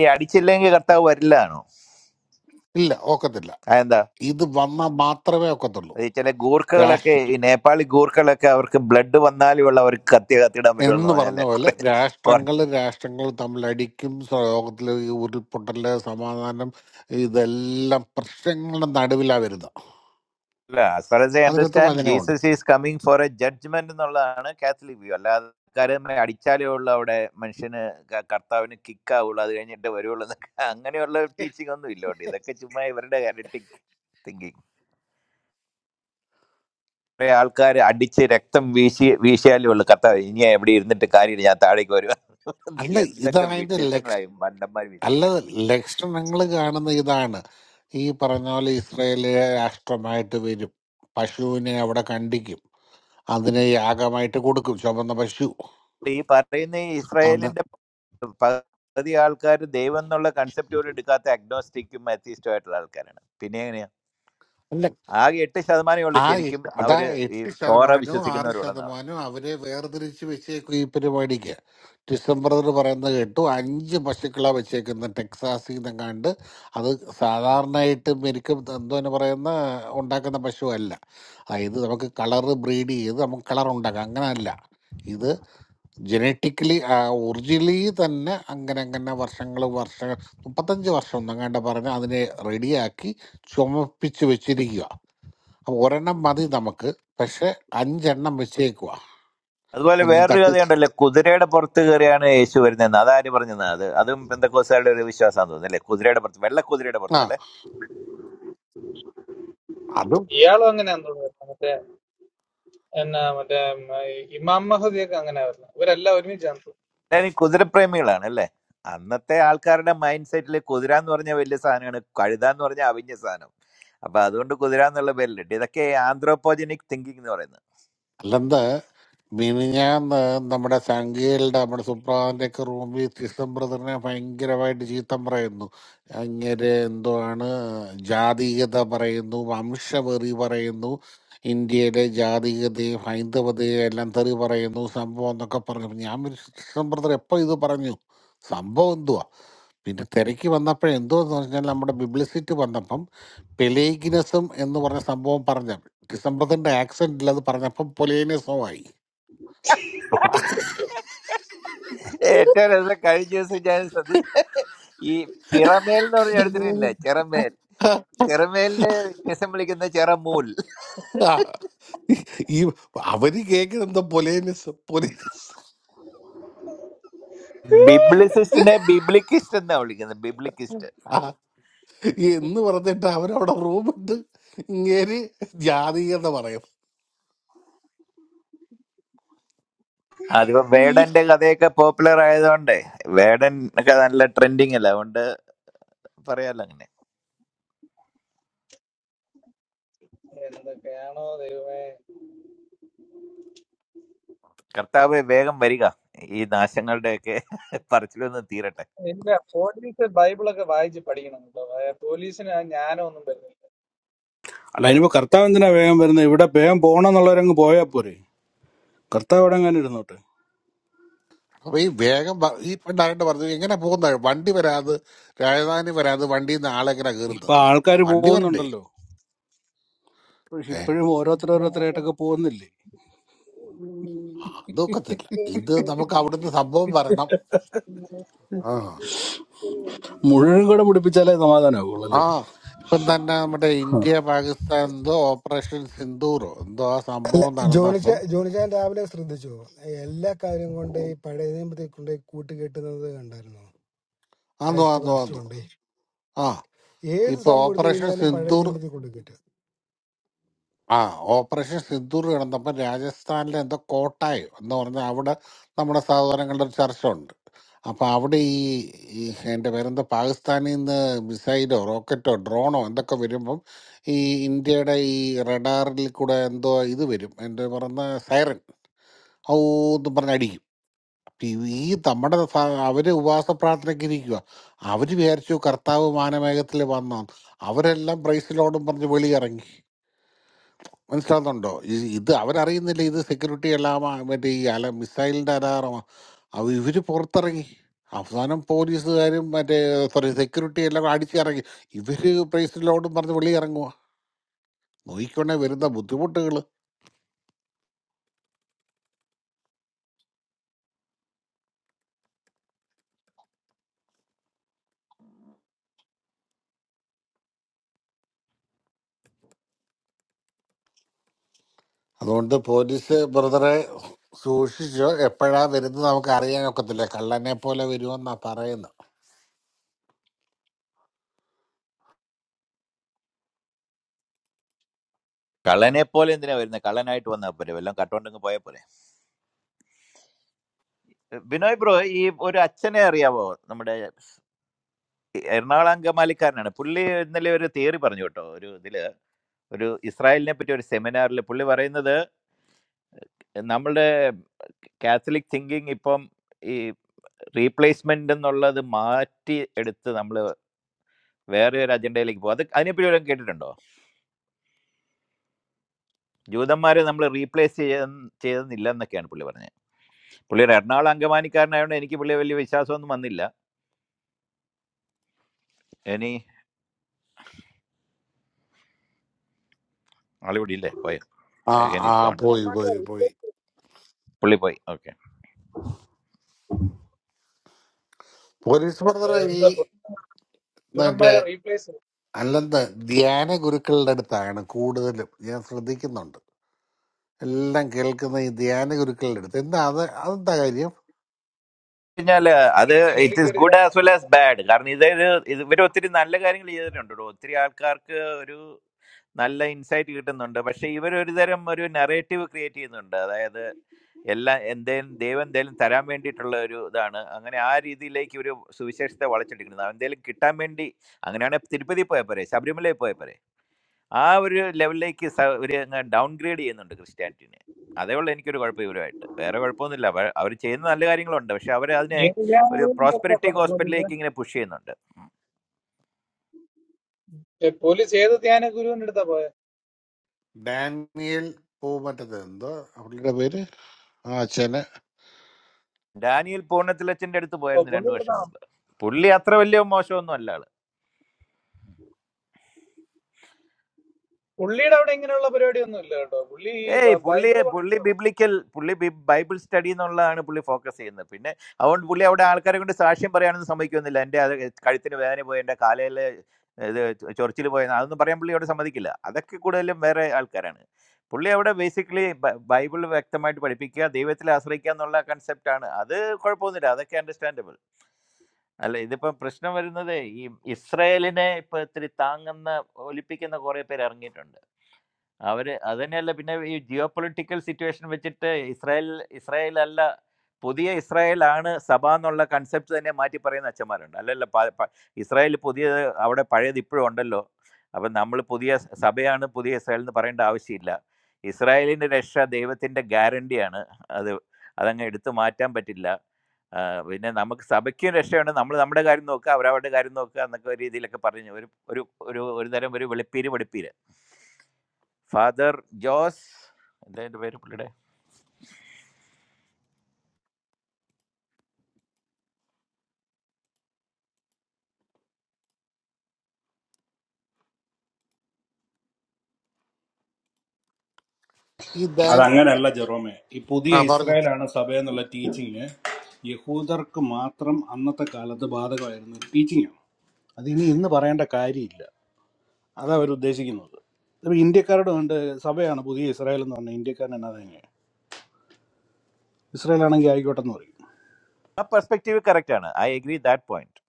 Speaker 21: ഈ അടിച്ചില്ലെങ്കിൽ കർത്താവ് വരില്ലാണോ
Speaker 11: ഇല്ല ഒക്കത്തില്ല
Speaker 21: അതെന്താ
Speaker 11: ഇത് വന്നാൽ മാത്രമേ ഒക്കത്തുള്ളൂ
Speaker 21: അത് ഈ ചില ഗൂർഖകളൊക്കെ ഈ നേപ്പാളി ഗൂർഖകളൊക്കെ അവർക്ക് ബ്ലഡ് വന്നാലും ഉള്ള അവർക്ക് കത്തി കത്തിടാൻ പറ്റുമെന്ന്
Speaker 11: എന്ന്
Speaker 21: പറഞ്ഞാൽ
Speaker 11: പറഞ്ഞ പോലെ
Speaker 21: കുറെ കുറെ
Speaker 11: രാഷ്ട്രങ്ങൾ രാഷ്ട്രങ്ങൾ തമ്മിൽ അടിക്കും സ- ലോകത്തിലെ ഈ ഉരുൾപൊട്ടല് സമാധാനം ഇതെല്ലാം പ്രശ്നങ്ങളുടെ നടുവിലാ വരുന്നത്
Speaker 21: ആസ് ഫാർ എസ് ഐ
Speaker 11: അതിനകത്ത്
Speaker 21: അണ്ടർസ്റ്റാൻഡ്
Speaker 11: വചനമുണ്ട്
Speaker 21: Jesus is coming for a judgment എന്നുള്ളതാണ് കാത്തലിക് വ്യൂ അല്ലാതെ കാര്യമായി അടിച്ചാലേ ഉള്ളൂ അവിടെ മനുഷ്യന് ക- കർത്താവിന് കിക്ക് ആവുള്ളൂ അത് കഴിഞ്ഞിട്ട് വരുവുള്ളൂ എന്നൊക്കെ അങ്ങനെയുള്ള ടീച്ചിങ് ഒന്നും ഇല്ലോട്ടെ ഇതൊക്കെ ചുമ്മാ ഇവരുടെ തിങ്കിങ് കുറെ ആൾക്കാർ അടിച്ച് രക്തം വീശി വീശിയാലേ ഉള്ളൂ കത്ത ഇനി എവിടെ ഇരുന്നിട്ട് കാര്യമില്ല ഞാൻ താഴേക്ക് വരുക
Speaker 11: അല്ല
Speaker 21: എന്തൊക്കെ
Speaker 11: ഇതായതിന്റെ ലക്ഷ
Speaker 21: വിഡിത്തങ്ങളായി മണ്ടന്മാർ
Speaker 11: അല്ല
Speaker 21: വിശ്വസിക്കുന്നത്
Speaker 11: ലക്ഷണങ്ങൾ കാണുന്ന ഇതാണ് ഈ പറഞ്ഞ പോലെ ഇസ്രയേല് രാഷ്ട്രമായിട്ട് വരും പശുവിനെ അവിടെ കണ്ടിക്കും അതിനെ യാഗമായിട്ട് കൊടുക്കും ചുമന്ന പശു
Speaker 21: ഈ പറയുന്ന ഈ ഇസ്രായേലിന്റെ
Speaker 11: അന്ന്
Speaker 21: പകുതി ആൾക്കാർ ദൈവം എന്നുള്ള കൺസെപ്റ്റ് പോലും എടുക്കാത്ത അഗ്നോസ്റ്റിക്കും അത്യസ്റ്റും ആയിട്ടുള്ള ആൾക്കാരാണ് പിന്നെ എങ്ങനെയാ ആകെ എട്ട് ശതമാനമേ ഉള്ളൂ
Speaker 11: ആ
Speaker 21: ശരിക്കും
Speaker 11: എട്ട്- അതാ
Speaker 21: അവര് ഈ
Speaker 11: എട്ട്
Speaker 21: തോറ
Speaker 11: ശതമാനവും ആറ്
Speaker 21: വിശ്വസിക്കുന്നവരുള്ളതാണ്
Speaker 11: ശതമാനവും അവരെ വേർതിരിച്ച് വെച്ചേക്കും ഈ പരിപാടിക്ക് ഡിസംബർ എന്ന് പറയുന്നത് കേട്ടു അഞ്ച് പശുക്കളാണ് വെച്ചേക്കുന്നത് ടെക്സാസിൽ നിന്നും കണ്ട് അത് സാധാരണയായിട്ട് മെരിക്കും എന്തോന്ന് പറയുന്ന ഉണ്ടാക്കുന്ന പശു അല്ല അതായത് നമുക്ക് കളർ ബ്രീഡ് ചെയ്ത് നമുക്ക് കളർ ഉണ്ടാക്കാം അങ്ങനല്ല ഇത് ജനറ്റിക്കലി ഒറിജിനലി തന്നെ അങ്ങനെ അങ്ങനെ വർഷങ്ങൾ വർഷങ്ങൾ മുപ്പത്തഞ്ച് വർഷം ഒന്നും കണ്ട പറഞ്ഞ് അതിനെ റെഡിയാക്കി ചുമപ്പിച്ച് വെച്ചിരിക്കുക അപ്പൊ ഒരെണ്ണം മതി നമുക്ക് പക്ഷെ അഞ്ചെണ്ണം വെച്ചേക്കുക
Speaker 21: അതുപോലെ
Speaker 11: ഒന്ന്
Speaker 21: വേറൊരു
Speaker 11: തട്ടി
Speaker 21: കഥയുണ്ടല്ലോ കുതിരയുടെ പുറത്ത് കയറിയാണ് യേശു വരുന്നതെന്ന് അതാര് പറഞ്ഞത് അത് അതും പെന്തക്കോസുകാരുടെ ഒരു വിശ്വാസമാണെന്ന് തോന്നുന്നു അല്ലേ കുതിരയുടെ പുറത്ത് വെള്ള കുതിരയുടെ
Speaker 11: ആ
Speaker 21: പുറത്ത്
Speaker 11: അതും
Speaker 24: ഇയാളും അങ്ങനെയാന്ന് തോന്നുന്നു മറ്റേ എന്നാ മറ്റേ ഉം, ഈ ഇമാം മഹദിയൊക്കെ അങ്ങനെ വരുന്നത് ഇവരെല്ലാം ഒരുമിച്ചാന്ന്
Speaker 21: എല്ലാവരും കുതിരപ്രേമികളാണ് അല്ലേ അന്നത്തെ ആൾക്കാരുടെ മൈൻഡ് സെറ്റിൽ കുതിര എന്ന് പറഞ്ഞ വലിയ സാധനമാണ് കഴുത എന്ന് പറഞ്ഞ അവിഞ്ഞ സാധനം അപ്പൊ അതുകൊണ്ട് കുതിര എന്നുള്ള പേരിലിട്ട് ഇതൊക്കെ ആന്ത്രോപോജനിക് തിങ്കിങ് എന്ന് പറയുന്നത്
Speaker 11: അല്ലെന്ത് മിനിഞ്ഞാന്ന് നമ്മുടെ സംഖ്യയിലുടെ നമ്മുടെ സുപ്രഭാതന്റെ ഒക്കെ റൂമിൽ സിസ്റ്റം ബ്രദറിനെ ഭയങ്കരമായിട്ട് ചീത്തം പറയുന്നു അങ്ങനെ എന്തോ ആണ് ജാതീയത പറയുന്നു വംശവെറി പറയുന്നു ഇന്ത്യയിലെ ജാതീയതയും ഹൈന്ദവതയും എല്ലാം തെറി പറയുന്നു സംഭവം എന്നൊക്കെ പറഞ്ഞു ഞാൻ സിസ്റ്റം ബ്രദർ എപ്പോൾ ഇത് പറഞ്ഞു സംഭവം എന്തുവാ പിന്നെ തിരക്ക് വന്നപ്പോഴേ എന്തോന്ന് പറഞ്ഞാൽ നമ്മുടെ ബിബ്ലിസിറ്റി വന്നപ്പം പെലേഗിനസം എന്ന് പറഞ്ഞ സംഭവം പറഞ്ഞ ഡിസംബറിന്റെ ആക്സിഡന്റിൽ അത് പറഞ്ഞപ്പം പൊലേനസോ ആയി അപ്പൊ
Speaker 21: ഏറ്റവും രസം കഴിഞ്ഞ ദിവസം ഞാൻ ശ്രദ്ധിച്ച ഈ ചിറമേൽ എന്ന് പറഞ്ഞ എടുത്തിട്ടില്ല ചിറമേൽ ചിറമേലിന്റെ വ്യത്യാസം വിളിക്കുന്ന ചിറമൂൽ
Speaker 11: ഈ അവര് കേൾക്കുന്നത് പൊലേനസ് പൊലേ
Speaker 21: ബിബ്ലിസിസ്റ്റിനെ ബിബ്ലിക്കിസ്റ്റ് എന്നാ വിളിക്കുന്നത് ബിബ്ലിക്കിസ്റ്റ്
Speaker 11: ആ, എന്ന് പറഞ്ഞിട്ട് അവരവിടെ റൂമിട്ട് ഇങ്ങേര് ജാതീയത പറയും
Speaker 21: അതിപ്പോ
Speaker 11: ഈ-
Speaker 21: വേടന്റെ കഥയൊക്കെ പോപ്പുലർ ആയതുകൊണ്ട് വേടൻ ഒക്കെ നല്ല ട്രെൻഡിങ് അല്ല അതുകൊണ്ട് പറയാലോ അങ്ങനെ
Speaker 24: തോന്നുന്നു എന്തൊക്കെയാണോ ദൈവമേ
Speaker 21: കർത്താവെ വേഗം വരിക ഈ നാശങ്ങളുടെയൊക്കെ പറച്ചിലൊന്ന് തീരട്ടെ
Speaker 24: ഇല്ല പോലീസ് ബൈബിളൊക്കെ വായിച്ച് പഠിക്കണം കേട്ടോ അതായത് പോലീസിന് ആ ജ്ഞാനം ഒന്നും
Speaker 28: അല്ല ഇനിയിപ്പോ കർത്താവ് എന്തിനാ വേഗം വരുന്നത് ഇവിടെ വേഗം പോകണം എന്നുള്ളവരങ്ങ് പോയാൽ പോരെ കർത്താവ് ഇവിടെ അങ്ങനെ ഇരുന്നോട്ടെ
Speaker 11: അപ്പൊ ഈ വേഗം വ- ഈ പണ്ടായിട്ട് പറഞ്ഞു എങ്ങനെ പോകുന്ന വണ്ടി വരാതെ രാജധാനി വരാതെ വണ്ടിയിൽ നിന്ന് ആളെങ്ങനെ കയറുന്നത്
Speaker 28: ഇപ്പൊ ആൾക്കാർ
Speaker 11: വണ്ടി വരണ്ടേ
Speaker 28: പോകുന്നുണ്ടല്ലോ പക്ഷെ
Speaker 11: ഏ
Speaker 28: ഇപ്പോഴും ഓരോരുത്തരോരോരുത്തരായിട്ടൊക്കെ പോകുന്നില്ലേ
Speaker 24: വരുന്നില്ല
Speaker 11: അതൊക്കത്തില്ല ഇത് നമുക്ക് അവിടുന്ന് സംഭവം വരണം ആ
Speaker 28: മുഴുവൻ കൂടെ പിടിപ്പിച്ചാലേ സമാധാനമാവുള്ളൂ
Speaker 11: ആ
Speaker 28: അല്ലേ
Speaker 11: ഇപ്പം തന്നെ നമ്മുടെ
Speaker 28: ഹ.
Speaker 11: ഇന്ത്യ പാകിസ്ഥാൻ എന്തോ ഓപ്പറേഷൻ സിന്ദൂറോ എന്തോ ആ
Speaker 1: അല്ല,
Speaker 11: സംഭവം
Speaker 1: ജോണിച്ച
Speaker 11: നടന്നപ്പം
Speaker 1: ജോണിച്ചാൻ രാവിലെ ശ്രദ്ധിച്ചോ എല്ലാ കാര്യം കൊണ്ട് ഈ പഴയ നിയമത്തിൽ കൊണ്ട് കൂട്ടുകെട്ടുന്നത് കണ്ടായിരുന്നോ
Speaker 11: ആന്നു
Speaker 1: ക്രൈസ്റ്റ്
Speaker 11: ആന്നു
Speaker 1: പാസ്റ്റർ
Speaker 11: ആന്നു
Speaker 1: കൊണ്ട്
Speaker 11: ആ
Speaker 1: ഏത്
Speaker 11: ഇപ്പൊ
Speaker 1: സംഭവം എടുത്തു
Speaker 11: ഓപ്പറേഷൻ
Speaker 1: കഴിഞ്ഞാലും പഴയ
Speaker 11: സിന്ദൂർ
Speaker 1: നിയമത്തിൽ കൊണ്ട് കെട്ടും.
Speaker 11: ആ ഓപ്പറേഷൻ സിന്ദൂർ കിടന്നപ്പം രാജസ്ഥാനിലെ എന്തോ കോട്ടായോ എന്ന് പറഞ്ഞാൽ അവിടെ നമ്മുടെ സഹോദരങ്ങളുടെ ഒരു ചർച്ച ഉണ്ട് അപ്പൊ അവിടെ ഈ ഈ എന്റെ പേരെന്തോ പാകിസ്ഥാനിൽ നിന്ന് മിസൈലോ റോക്കറ്റോ ഡ്രോണോ എന്തൊക്കെ വരുമ്പം ഈ ഇന്ത്യയുടെ ഈ റഡാറിൽ കൂടെ എന്തോ ഇത് വരും എന്റെ പറഞ്ഞ സൈറൻ ഔ എന്ന് പറഞ്ഞ് അടിക്കും ഈ നമ്മുടെ സ- അവര് ഉപവാസ പ്രാർത്ഥനയ്ക്ക് ഇരിക്കുക അവര് വിചാരിച്ചു കർത്താവ് മാനമേഘത്തിൽ വന്നാണ് അവരെല്ലാം പ്രൈസിലോടും പറഞ്ഞ് വെളിയിറങ്ങി മനസ്സിലാകുന്നുണ്ടോ ഇത് ഇത് അവരറിയുന്നില്ല ഇത് സെക്യൂരിറ്റി എല്ലാം ആ മറ്റേ ഈ അല മിസൈലിന്റെ അലാറമാ അവ ഇവര് പുറത്തിറങ്ങി അവസാനം പോലീസുകാരും മറ്റേ സോറി സെക്യൂരിറ്റി എല്ലാം അടിച്ചിറങ്ങി ഇവര് പ്രൈസിലോടും പറഞ്ഞ് വെളിയിറങ്ങുക നോക്കിക്കൊണ്ടേ വരുന്ന ബുദ്ധിമുട്ടുകൾ അതുകൊണ്ട് പോലീസ് ബ്രദറെ സൂക്ഷിച്ചോ എപ്പോഴാ വരുന്നത് നമുക്ക് അറിയാൻ ഒക്കത്തില്ല കള്ളനെ പോലെ വരുമെന്നാ പറയുന്നത്
Speaker 21: കള്ളനെ പോലെ എന്തിനാ വരുന്നത് കള്ളനായിട്ട് വന്നാൽ പോലെ വല്ലതും കട്ടോണ്ടെങ്കിൽ പോയാൽ പോലെ ബിനോയ് ബ്രോ ഈ ഒരു അച്ഛനെ അറിയാവോ നമ്മുടെ എറണാകുളം അങ്കമാലിക്കാരനാണ് പുള്ളി ഇന്നലെ ഒരു തിയറി പറഞ്ഞു കേട്ടോ ഒരു ഇതില് ഒരു ഇസ്രായേലിനെ പറ്റി ഒരു സെമിനാറിൽ പുള്ളി പറയുന്നത് നമ്മളുടെ കാത്തലിക് തിങ്കിങ് ഇപ്പം ഈ റീപ്ലേസ്മെന്റ് എന്നുള്ളത് മാറ്റി എടുത്ത് നമ്മൾ വേറെ ഒരു അജണ്ടയിലേക്ക് പോകും അത് അതിനെപ്പറ്റി വല്ലതും കേട്ടിട്ടുണ്ടോ ജൂതന്മാരെ നമ്മൾ റീപ്ലേസ് ചെയ്യ ചെയ്തെന്നില്ല എന്നൊക്കെയാണ് പുള്ളി പറഞ്ഞത് പുള്ളിയുടെ എറണാകുളം അങ്കമാനിക്കാരനായതുകൊണ്ട് എനിക്ക് പുള്ളിയെ വലിയ വിശ്വാസമൊന്നും വന്നില്ല ഇനി ആളിവിടെ ഇല്ലേ പോയ
Speaker 11: ആ
Speaker 21: അഗൈൻ
Speaker 11: ആ
Speaker 21: ഈസ് ഗോൺ
Speaker 11: പോയി പോയി പോയി
Speaker 21: പുള്ളി പോയി ഓക്കെ
Speaker 11: പോലീസ്
Speaker 24: ഏ,
Speaker 11: ബ്രദറെ ഈ
Speaker 24: എന്താ
Speaker 11: മറ്റേ
Speaker 24: പുരുഷന്മാരെ റീപ്ലേസ്
Speaker 11: അല്ലെന്ന് ധ്യാന ഗുരുക്കളുടെ അടുത്താണ് കൂടുതലും ഞാൻ ശ്രദ്ധിക്കുന്നുണ്ട് എല്ലാം കേൾക്കുന്ന ഈ ധ്യാന ഗുരുക്കളുടെ അടുത്ത് എന്താ അത് അതെന്താ കാര്യം
Speaker 21: കഴിഞ്ഞാൽ അത് ഇറ്റ്
Speaker 24: പുള്ളിക്ക്
Speaker 21: ഈസ്
Speaker 24: ഒരു
Speaker 21: ഗുഡ്
Speaker 24: ധ്യാനം
Speaker 21: ആസ് വെൽ ആസ് ബാഡ് കാരണം ഇതൊരു ഇത് ഇവർ ഒത്തിരി നല്ല കാര്യങ്ങൾ ചെയ്തിട്ടുണ്ട് ഒത്തിരി ആൾക്കാർക്ക് ഒരു നല്ല ഇൻസൈറ്റ് കിട്ടുന്നുണ്ട് പക്ഷെ ഇവർ ഒരു തരം ഒരു നെറേറ്റീവ് ക്രിയേറ്റ് ചെയ്യുന്നുണ്ട് അതായത് എല്ലാം എന്തേലും ദൈവം എന്തേലും തരാൻ വേണ്ടിയിട്ടുള്ള ഒരു ഇതാണ് അങ്ങനെ ആ രീതിയിലേക്ക് ഒരു സുവിശേഷത്തെ വളച്ചെടുക്കുന്നത് എന്തേലും കിട്ടാൻ വേണ്ടി അങ്ങനെയാണ് തിരുപ്പതി പോയ പോരെ ശബരിമലയിൽ പോയ പോരെ ആ ഒരു ലെവലിലേക്ക് സ- ഒരു ഡൗൺ ഗ്രേഡ് ചെയ്യുന്നുണ്ട് ക്രിസ്ത്യാനിറ്റിനെ അതേ ഉള്ളൂ എനിക്കൊരു കുഴപ്പം ഇവരുമായിട്ട് വേറെ കുഴപ്പമൊന്നുമില്ല അവർ ചെയ്യുന്ന നല്ല കാര്യങ്ങളുണ്ട് പക്ഷെ അവർ അതിനെ
Speaker 24: ഏത്
Speaker 21: ഒരു
Speaker 24: ധ്യാനഗുരുവിന്റെ അടുത്താ
Speaker 21: പ്രോസ്പെരിറ്റി
Speaker 24: പോയെ പോലീസ്
Speaker 21: ഹോസ്പിറ്റലിലേക്ക് ഇങ്ങനെ പുഷ് ചെയ്യുന്നുണ്ട്
Speaker 24: ഏ, പോലീസ് ഏത് ധ്യാന ഗുരുവിന്റെ അടുത്താ പോയെ
Speaker 11: ഡാനിയൽ പോ മറ്റത് എന്തോ അവളുടെ പേര് ആ അച്ഛന്
Speaker 21: ഡാനിയൽ പൂർണ്ണത്തിലച്ചന്റെ അടുത്ത്
Speaker 24: ഓ
Speaker 21: പോയിരുന്നു
Speaker 24: പുള്ളി
Speaker 21: രണ്ടു വർഷം
Speaker 24: എടുത്താ
Speaker 21: മുമ്പ് പുള്ളി അത്ര വലിയ മോശമൊന്നും അല്ല ആള്
Speaker 24: പുള്ളിയുടെ അവിടെ ഇങ്ങനെയുള്ള പരിപാടി ഒന്നും ഇല്ല കേട്ടോ പുള്ളി ഈ
Speaker 21: ഏയ് പുള്ളി
Speaker 24: ബൈബിള്
Speaker 21: പുള്ളി ബിബ്ലിക്കൽ പുള്ളി ബി- ബൈബിൾ സ്റ്റഡി എന്നുള്ളതാണ് പുള്ളി ഫോക്കസ് ചെയ്യുന്നത് പിന്നെ അതുകൊണ്ട് പുള്ളി അവിടെ ആൾക്കാരെ കൊണ്ട് സാക്ഷ്യം പറയാനൊന്നും സമ്മതിക്കുന്നില്ല എൻ്റെ അത് കഴുത്തിന് വേദന പോയി എൻ്റെ കാലയിൽ ഇത് ചൊറിച്ചിൽ പോയി അതൊന്നും പറയാൻ പുള്ളി അവിടെ സമ്മതിക്കില്ല അതൊക്കെ കൂടുതലും വേറെ ആൾക്കാരാണ് പുള്ളി അവിടെ ബേസിക്കലി ബൈബിൾ വ്യക്തമായിട്ട് പഠിപ്പിക്കുക ദൈവത്തിൽ ആശ്രയിക്കുക എന്നുള്ള കൺസെപ്റ്റാണ് അത് കുഴപ്പമൊന്നുമില്ല അതൊക്കെ അണ്ടർസ്റ്റാൻഡബിൾ അല്ല ഇതിപ്പോ പ്രശ്നം വരുന്നത് ഈ ഇസ്രയേലിനെ ഇപ്പൊ ഇത്തിരി താങ്ങുന്ന ഒലിപ്പിക്കുന്ന കുറെ പേര് ഇറങ്ങിയിട്ടുണ്ട് അവര് അത് തന്നെയല്ല പിന്നെ ഈ ജിയോ പൊളിറ്റിക്കൽ സിറ്റുവേഷൻ വെച്ചിട്ട് ഇസ്രായേൽ ഇസ്രായേൽ അല്ല പുതിയ ഇസ്രായേൽ ആണ് സഭ എന്നുള്ള കൺസെപ്റ്റ് തന്നെ മാറ്റി പറയുന്ന അച്ഛന്മാരുണ്ട് അല്ലല്ല പ- പ- ഇസ്രായേൽ പുതിയ അവിടെ പഴയത് ഇപ്പോഴും ഉണ്ടല്ലോ അപ്പം നമ്മൾ പുതിയ സഭയാണ് പുതിയ ഇസ്രായേൽ എന്ന് പറയേണ്ട ആവശ്യമില്ല ഇസ്രായേലിൻ്റെ രക്ഷ ദൈവത്തിൻ്റെ ഗ്യാരണ്ടിയാണ് അത് അതങ്ങ് എടുത്തു മാറ്റാൻ പറ്റില്ല ആ, പിന്നെ നമുക്ക് സഭയ്ക്കും രക്ഷയുണ്ട് നമ്മൾ നമ്മുടെ കാര്യം നോക്കുക അവരവരുടെ കാര്യം നോക്കുക എന്നൊക്കെ ഒരു രീതിയിലൊക്കെ പറഞ്ഞു ഒരു ഒരു ഒരു ഒരു തരം ഒരു വെളുപ്പീര് വെളുപ്പീര് ഫാദർ ജോസ് എന്താ പേര് പുള്ളിയുടെ
Speaker 11: ഈ ഡാൻ
Speaker 28: അതങ്ങനെയല്ല ജെറോമേ ഈ പുതിയ
Speaker 11: ആ പറഞ്ഞു
Speaker 28: ഇസ്രായേലാണ് സഭ എന്നുള്ള ടീച്ചിങ് യഹൂദർക്ക് മാത്രം അന്നത്തെ കാലത്ത് ബാധകമായിരുന്ന ഒരു ടീച്ചിങ്ങാണ് അത് ഇനി ഇന്ന് പറയേണ്ട കാര്യമില്ല അതാ അവർ ഉദ്ദേശിക്കുന്നത് അപ്പൊ ഇന്ത്യക്കാരോട് കണ്ട് സഭയാണ് പുതിയ ഇസ്രായേൽ എന്ന് പറഞ്ഞാൽ ഇന്ത്യക്കാരൻ എന്നാ തന്നെ ഇസ്രായേൽ ആണെങ്കിൽ ആയിക്കോട്ടെ എന്ന് പറയും
Speaker 21: ആ പെർസ്പെക്റ്റീവ് കറക്റ്റ് ആണ് ഐ അഗ്രി ദാറ്റ് പോയിന്റ്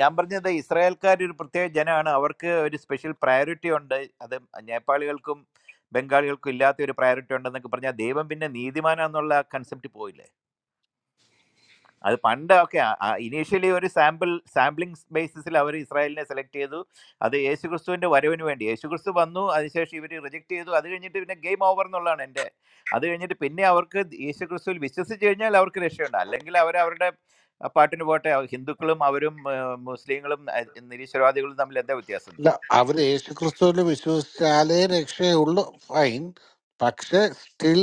Speaker 21: ഞാൻ പറഞ്ഞത് ഇസ്രായേൽക്കാർ ഒരു പ്രത്യേക ജനമാണ് അവർക്ക് ഒരു സ്പെഷ്യൽ പ്രയോറിറ്റി ഉണ്ട് അത് നേപ്പാളികൾക്കും ബംഗാളികൾക്കും ഇല്ലാത്ത ഒരു പ്രയോറിറ്റി ഉണ്ടെന്നൊക്കെ പറഞ്ഞാൽ ദൈവം പിന്നെ നീതിമാനാന്നുള്ള കൺസെപ്റ്റ് പോയില്ലേ അത് പണ്ടൊക്കെ ഇനീഷ്യലി ഒരു സാമ്പിൾ സാമ്പിളിംഗ് ബേസിസിൽ അവർ ഇസ്രായേലിനെ സെലക്ട് ചെയ്തു അത് യേശുക്രിസ്തുവിന്റെ വരവിന് വേണ്ടി യേശുക്രിസ്തു വന്നു അതിനുശേഷം ഇവർ റിജക്ട് ചെയ്തു അത് കഴിഞ്ഞിട്ട് പിന്നെ ഗെയിം ഓവർ എന്നുള്ളതാണ് എൻ്റെ അത് കഴിഞ്ഞിട്ട് പിന്നെ അവർക്ക് യേശുക്രിസ്തുവിൽ വിശ്വസിച്ച് കഴിഞ്ഞാൽ അവർക്ക് രക്ഷയുണ്ട് അല്ലെങ്കിൽ അവർ അവരുടെ പാട്ടിന് പോട്ടെ അവ- ഹിന്ദുക്കളും അവരും ആ, മുസ്ലിങ്ങളും ആ, നിരീശ്വരവാദികളും തമ്മിൽ എന്താ വ്യത്യാസം
Speaker 11: അല്ല അവര് യേശു ക്രിസ്തുവിൽ വിശ്വസിച്ചാലേ രക്ഷയുള്ളൂ ഫൈൻ പക്ഷെ സ്റ്റിൽ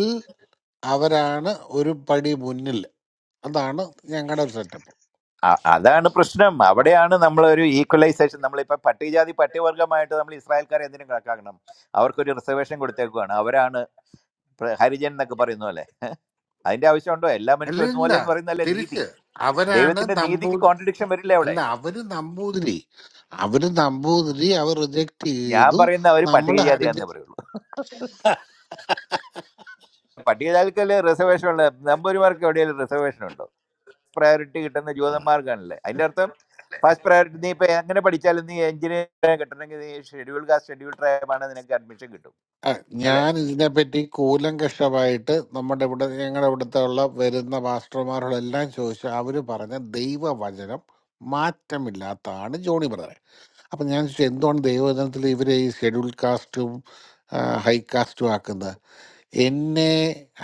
Speaker 11: അവരാണ് ഒരു പടി മുന്നിൽ അതാണ് ഞങ്ങളുടെ ഒരു സെറ്റപ്പ്
Speaker 21: അ- അതാണ് പ്രശ്നം അവിടെയാണ് നമ്മളൊരു ഈക്വലൈസേഷൻ നമ്മളിപ്പോൾ പട്ടികജാതി പട്ടികവർഗമായിട്ട് നമ്മൾ ഇസ്രായേൽക്കാരെ എന്തിനും കണക്കാക്കണം അവർക്കൊരു റിസർവേഷൻ കൊടുത്തേക്കുവാണ് അവരാണ് പ്ര- ഹരിജൻ എന്നൊക്കെ പറയുന്ന പോലെ അതിന്റെ ആവശ്യമുണ്ടോ എല്ലാ മനുഷ്യരും
Speaker 11: അല്ലില്ല
Speaker 21: ഒരുപോലെ എന്ന് പറയുന്നതല്ലേ നീതി
Speaker 11: തിരിച്ച് അവരാണ്
Speaker 21: ദൈവത്തിന്റെ നീതിക്ക്
Speaker 11: നമ്പൂതിരി
Speaker 21: കോൺട്രഡിക്ഷൻ വരില്ല അവിടെ
Speaker 11: അല്ല അവര് നമ്പൂതിരി അവര് നമ്പൂതിരി അവർ റിജക്ട്
Speaker 21: ഞാൻ
Speaker 11: ചെയ്തു
Speaker 21: പറയുന്ന അവർ
Speaker 11: നമ്മൾ ഹരിജ
Speaker 21: പട്ടികജാതിയാന്നേ പറയുള്ളൂ പട്ടികജാതിക്കല്ലേ റിസർവേഷൻ ഉള്ള നമ്പൂരിമാർക്ക് എവിടെയെങ്കിലും റിസർവേഷൻ ഉണ്ടോ പ്രയോറിറ്റി കിട്ടുന്ന ജൂതന്മാർക്കാണല്ലേ അതിന്റെ അർത്ഥം ഫസ്റ്റ് പ്രയോറിറ്റി നീ ഇപ്പൊ എങ്ങനെ പഠിച്ചാലും നീ എഞ്ചിനീയർ കിട്ടണമെങ്കിൽ നീ ഷെഡ്യൂൾ കാസ്റ്റ് ഷെഡ്യൂൾ ട്രൈബ് ആണ് നിനക്ക് അഡ്മിഷൻ കിട്ടും
Speaker 11: ആ,
Speaker 21: അല്ലെ
Speaker 11: ഞാൻ ഇതിനെപ്പറ്റി കൂലങ്കഷമായിട്ട് നമ്മുടെ ഇവിടെ ഞങ്ങളുടെ ഇവിടുത്തെ ഉള്ള വരുന്ന മാസ്റ്റർമാരോടെല്ലാം ചോദിച്ചു അവർ പറഞ്ഞ ദൈവവചനം മാറ്റമില്ലാത്തതാണ് ജോണി ബ്രദറെ അപ്പം ഞാൻ ചോദിച്ചു എന്തുകൊണ്ട് ദൈവവചനത്തിൽ ഇവരെ ഈ ഷെഡ്യൂൾ കാസ്റ്റും ഹൈ കാസ്റ്റും ആക്കുന്നത് എന്നെ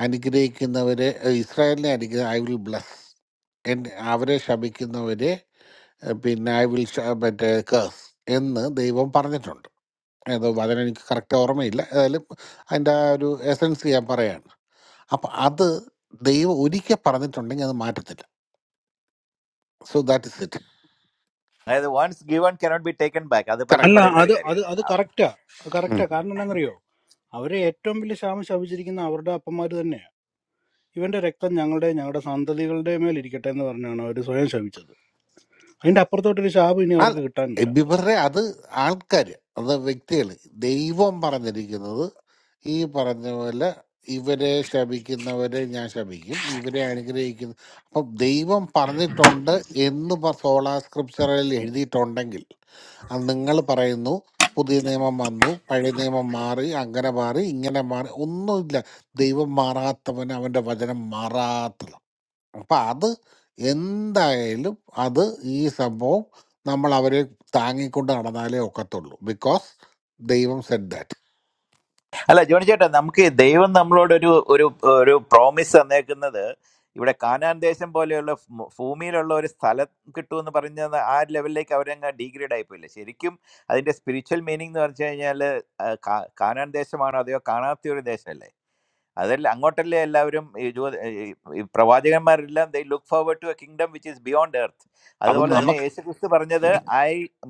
Speaker 11: അനുഗ്രഹിക്കുന്നവരെ ഏ, ഇസ്രായേലിനെ അനുഗ്രഹ ഐ വിൽ ബ്ലസ് എന്നെ അവരെ ശപിക്കുന്നവരെ ഏ, പിന്നെ ഐ വിൽ മറ്റേ കേസ് എന്ന് ദൈവം പറഞ്ഞിട്ടുണ്ട് ഏതോ അതിനെനിക്ക് കറക്റ്റ് ഓർമ്മയില്ല ഏതായാലും അതിൻ്റെ ആ ഒരു എസൻസ് ഞാൻ പറയാണ് അപ്പം അത് ദൈവം ഒരിക്കൽ പറഞ്ഞിട്ടുണ്ടെങ്കിൽ അത് മാറ്റത്തില്ല സോ ദാറ്റ് ഇസ് ഇറ്റ്
Speaker 21: അതായത് once given cannot be taken back അത് പലരും
Speaker 28: അല്ല
Speaker 11: കറക്റ്റ്
Speaker 21: പറയുന്ന
Speaker 28: അത്
Speaker 21: ഒരു
Speaker 28: അത് അത്
Speaker 21: കാര്യമാണ്
Speaker 28: കറക്റ്റാ അത് കറക്റ്റാ കാരണം എന്നാന്നറിയോ അവരെ ഏറ്റവും വലിയ ശാപം ശപിച്ചിരിക്കുന്ന അവരുടെ അപ്പന്മാര് തന്നെയാണ് ഇവന്റെ രക്തം ഞങ്ങളുടെ ഞങ്ങളുടെ സന്തതികളുടെ മേൽ ഇരിക്കട്ടെ എന്ന് പറഞ്ഞാണ് അവർ സ്വയം ശപിച്ചത് അതിന്റെ അപ്പുറത്തോട്ടൊരു ശാപം ഇനി
Speaker 11: അല്ല
Speaker 28: അവർക്ക് കിട്ടാനില്ല
Speaker 11: ഇവരുടെ അത് ആൾക്കാർ അത് വ്യക്തികൾ ദൈവം പറഞ്ഞിരിക്കുന്നത് ഈ പറഞ്ഞ പോലെ ഇവരെ ശപിക്കുന്നവരെ ഞാൻ ശപിക്കും ഇവരെ അനുഗ്രഹിക്കുന്ന അപ്പം ദൈവം പറഞ്ഞിട്ടുണ്ട് എന്ന് സോളാ സ്ക്രിപ്ചറിൽ എഴുതിയിട്ടുണ്ടെങ്കിൽ അത് നിങ്ങൾ പറയുന്നു പുതിയ നിയമം വന്നു പഴയ നിയമം മാറി അങ്ങനെ മാറി ഇങ്ങനെ മാറി ഒന്നുമില്ല ദൈവം മാറാത്തവന് അവൻ്റെ വചനം മാറാത്തത് അപ്പം അത് എന്തായാലും അത് ഈ സംഭവം നമ്മൾ അവരെ താങ്ങിക്കൊണ്ട് നടന്നാലേ ഒക്കത്തുള്ളൂ ബിക്കോസ് ദൈവം സെഡ് ദാറ്റ്
Speaker 21: അല്ല ജോണി ചേട്ടാ നമുക്ക് ദൈവം നമ്മളോട് ഒരു ഒരു ഒരു പ്രോമിസ് തന്നേക്കുന്നത് ഇവിടെ കാനാൻ ദേശം പോലെയുള്ള ഭൂ- ഭൂമിയിലുള്ള ഒരു സ്ഥലം കിട്ടുമെന്ന് പറഞ്ഞത് ആ ലെവലിലേക്ക് അവരങ്ങ് ഡീഗ്രേഡ് ആയിപ്പോയില്ല ശരിക്കും അതിന്റെ സ്പിരിച്വൽ മീനിങ് എന്ന് പറഞ്ഞു കഴിഞ്ഞാൽ കാനാൻ ദേശമാണോ അതെയോ കാണാത്ത ഒരു ദേശമല്ലേ അതല്ല അങ്ങോട്ടല്ലേ എല്ലാവരും ഈ ജോ- ഈ- ഈ പ്രവാചകന്മാരെല്ലാം they look forward to a kingdom which is beyond earth
Speaker 11: അത്
Speaker 21: അതുപോലെ തന്നെ
Speaker 11: നമുക്ക്
Speaker 21: യേശു ക്രിസ്തു പറഞ്ഞത് ഐ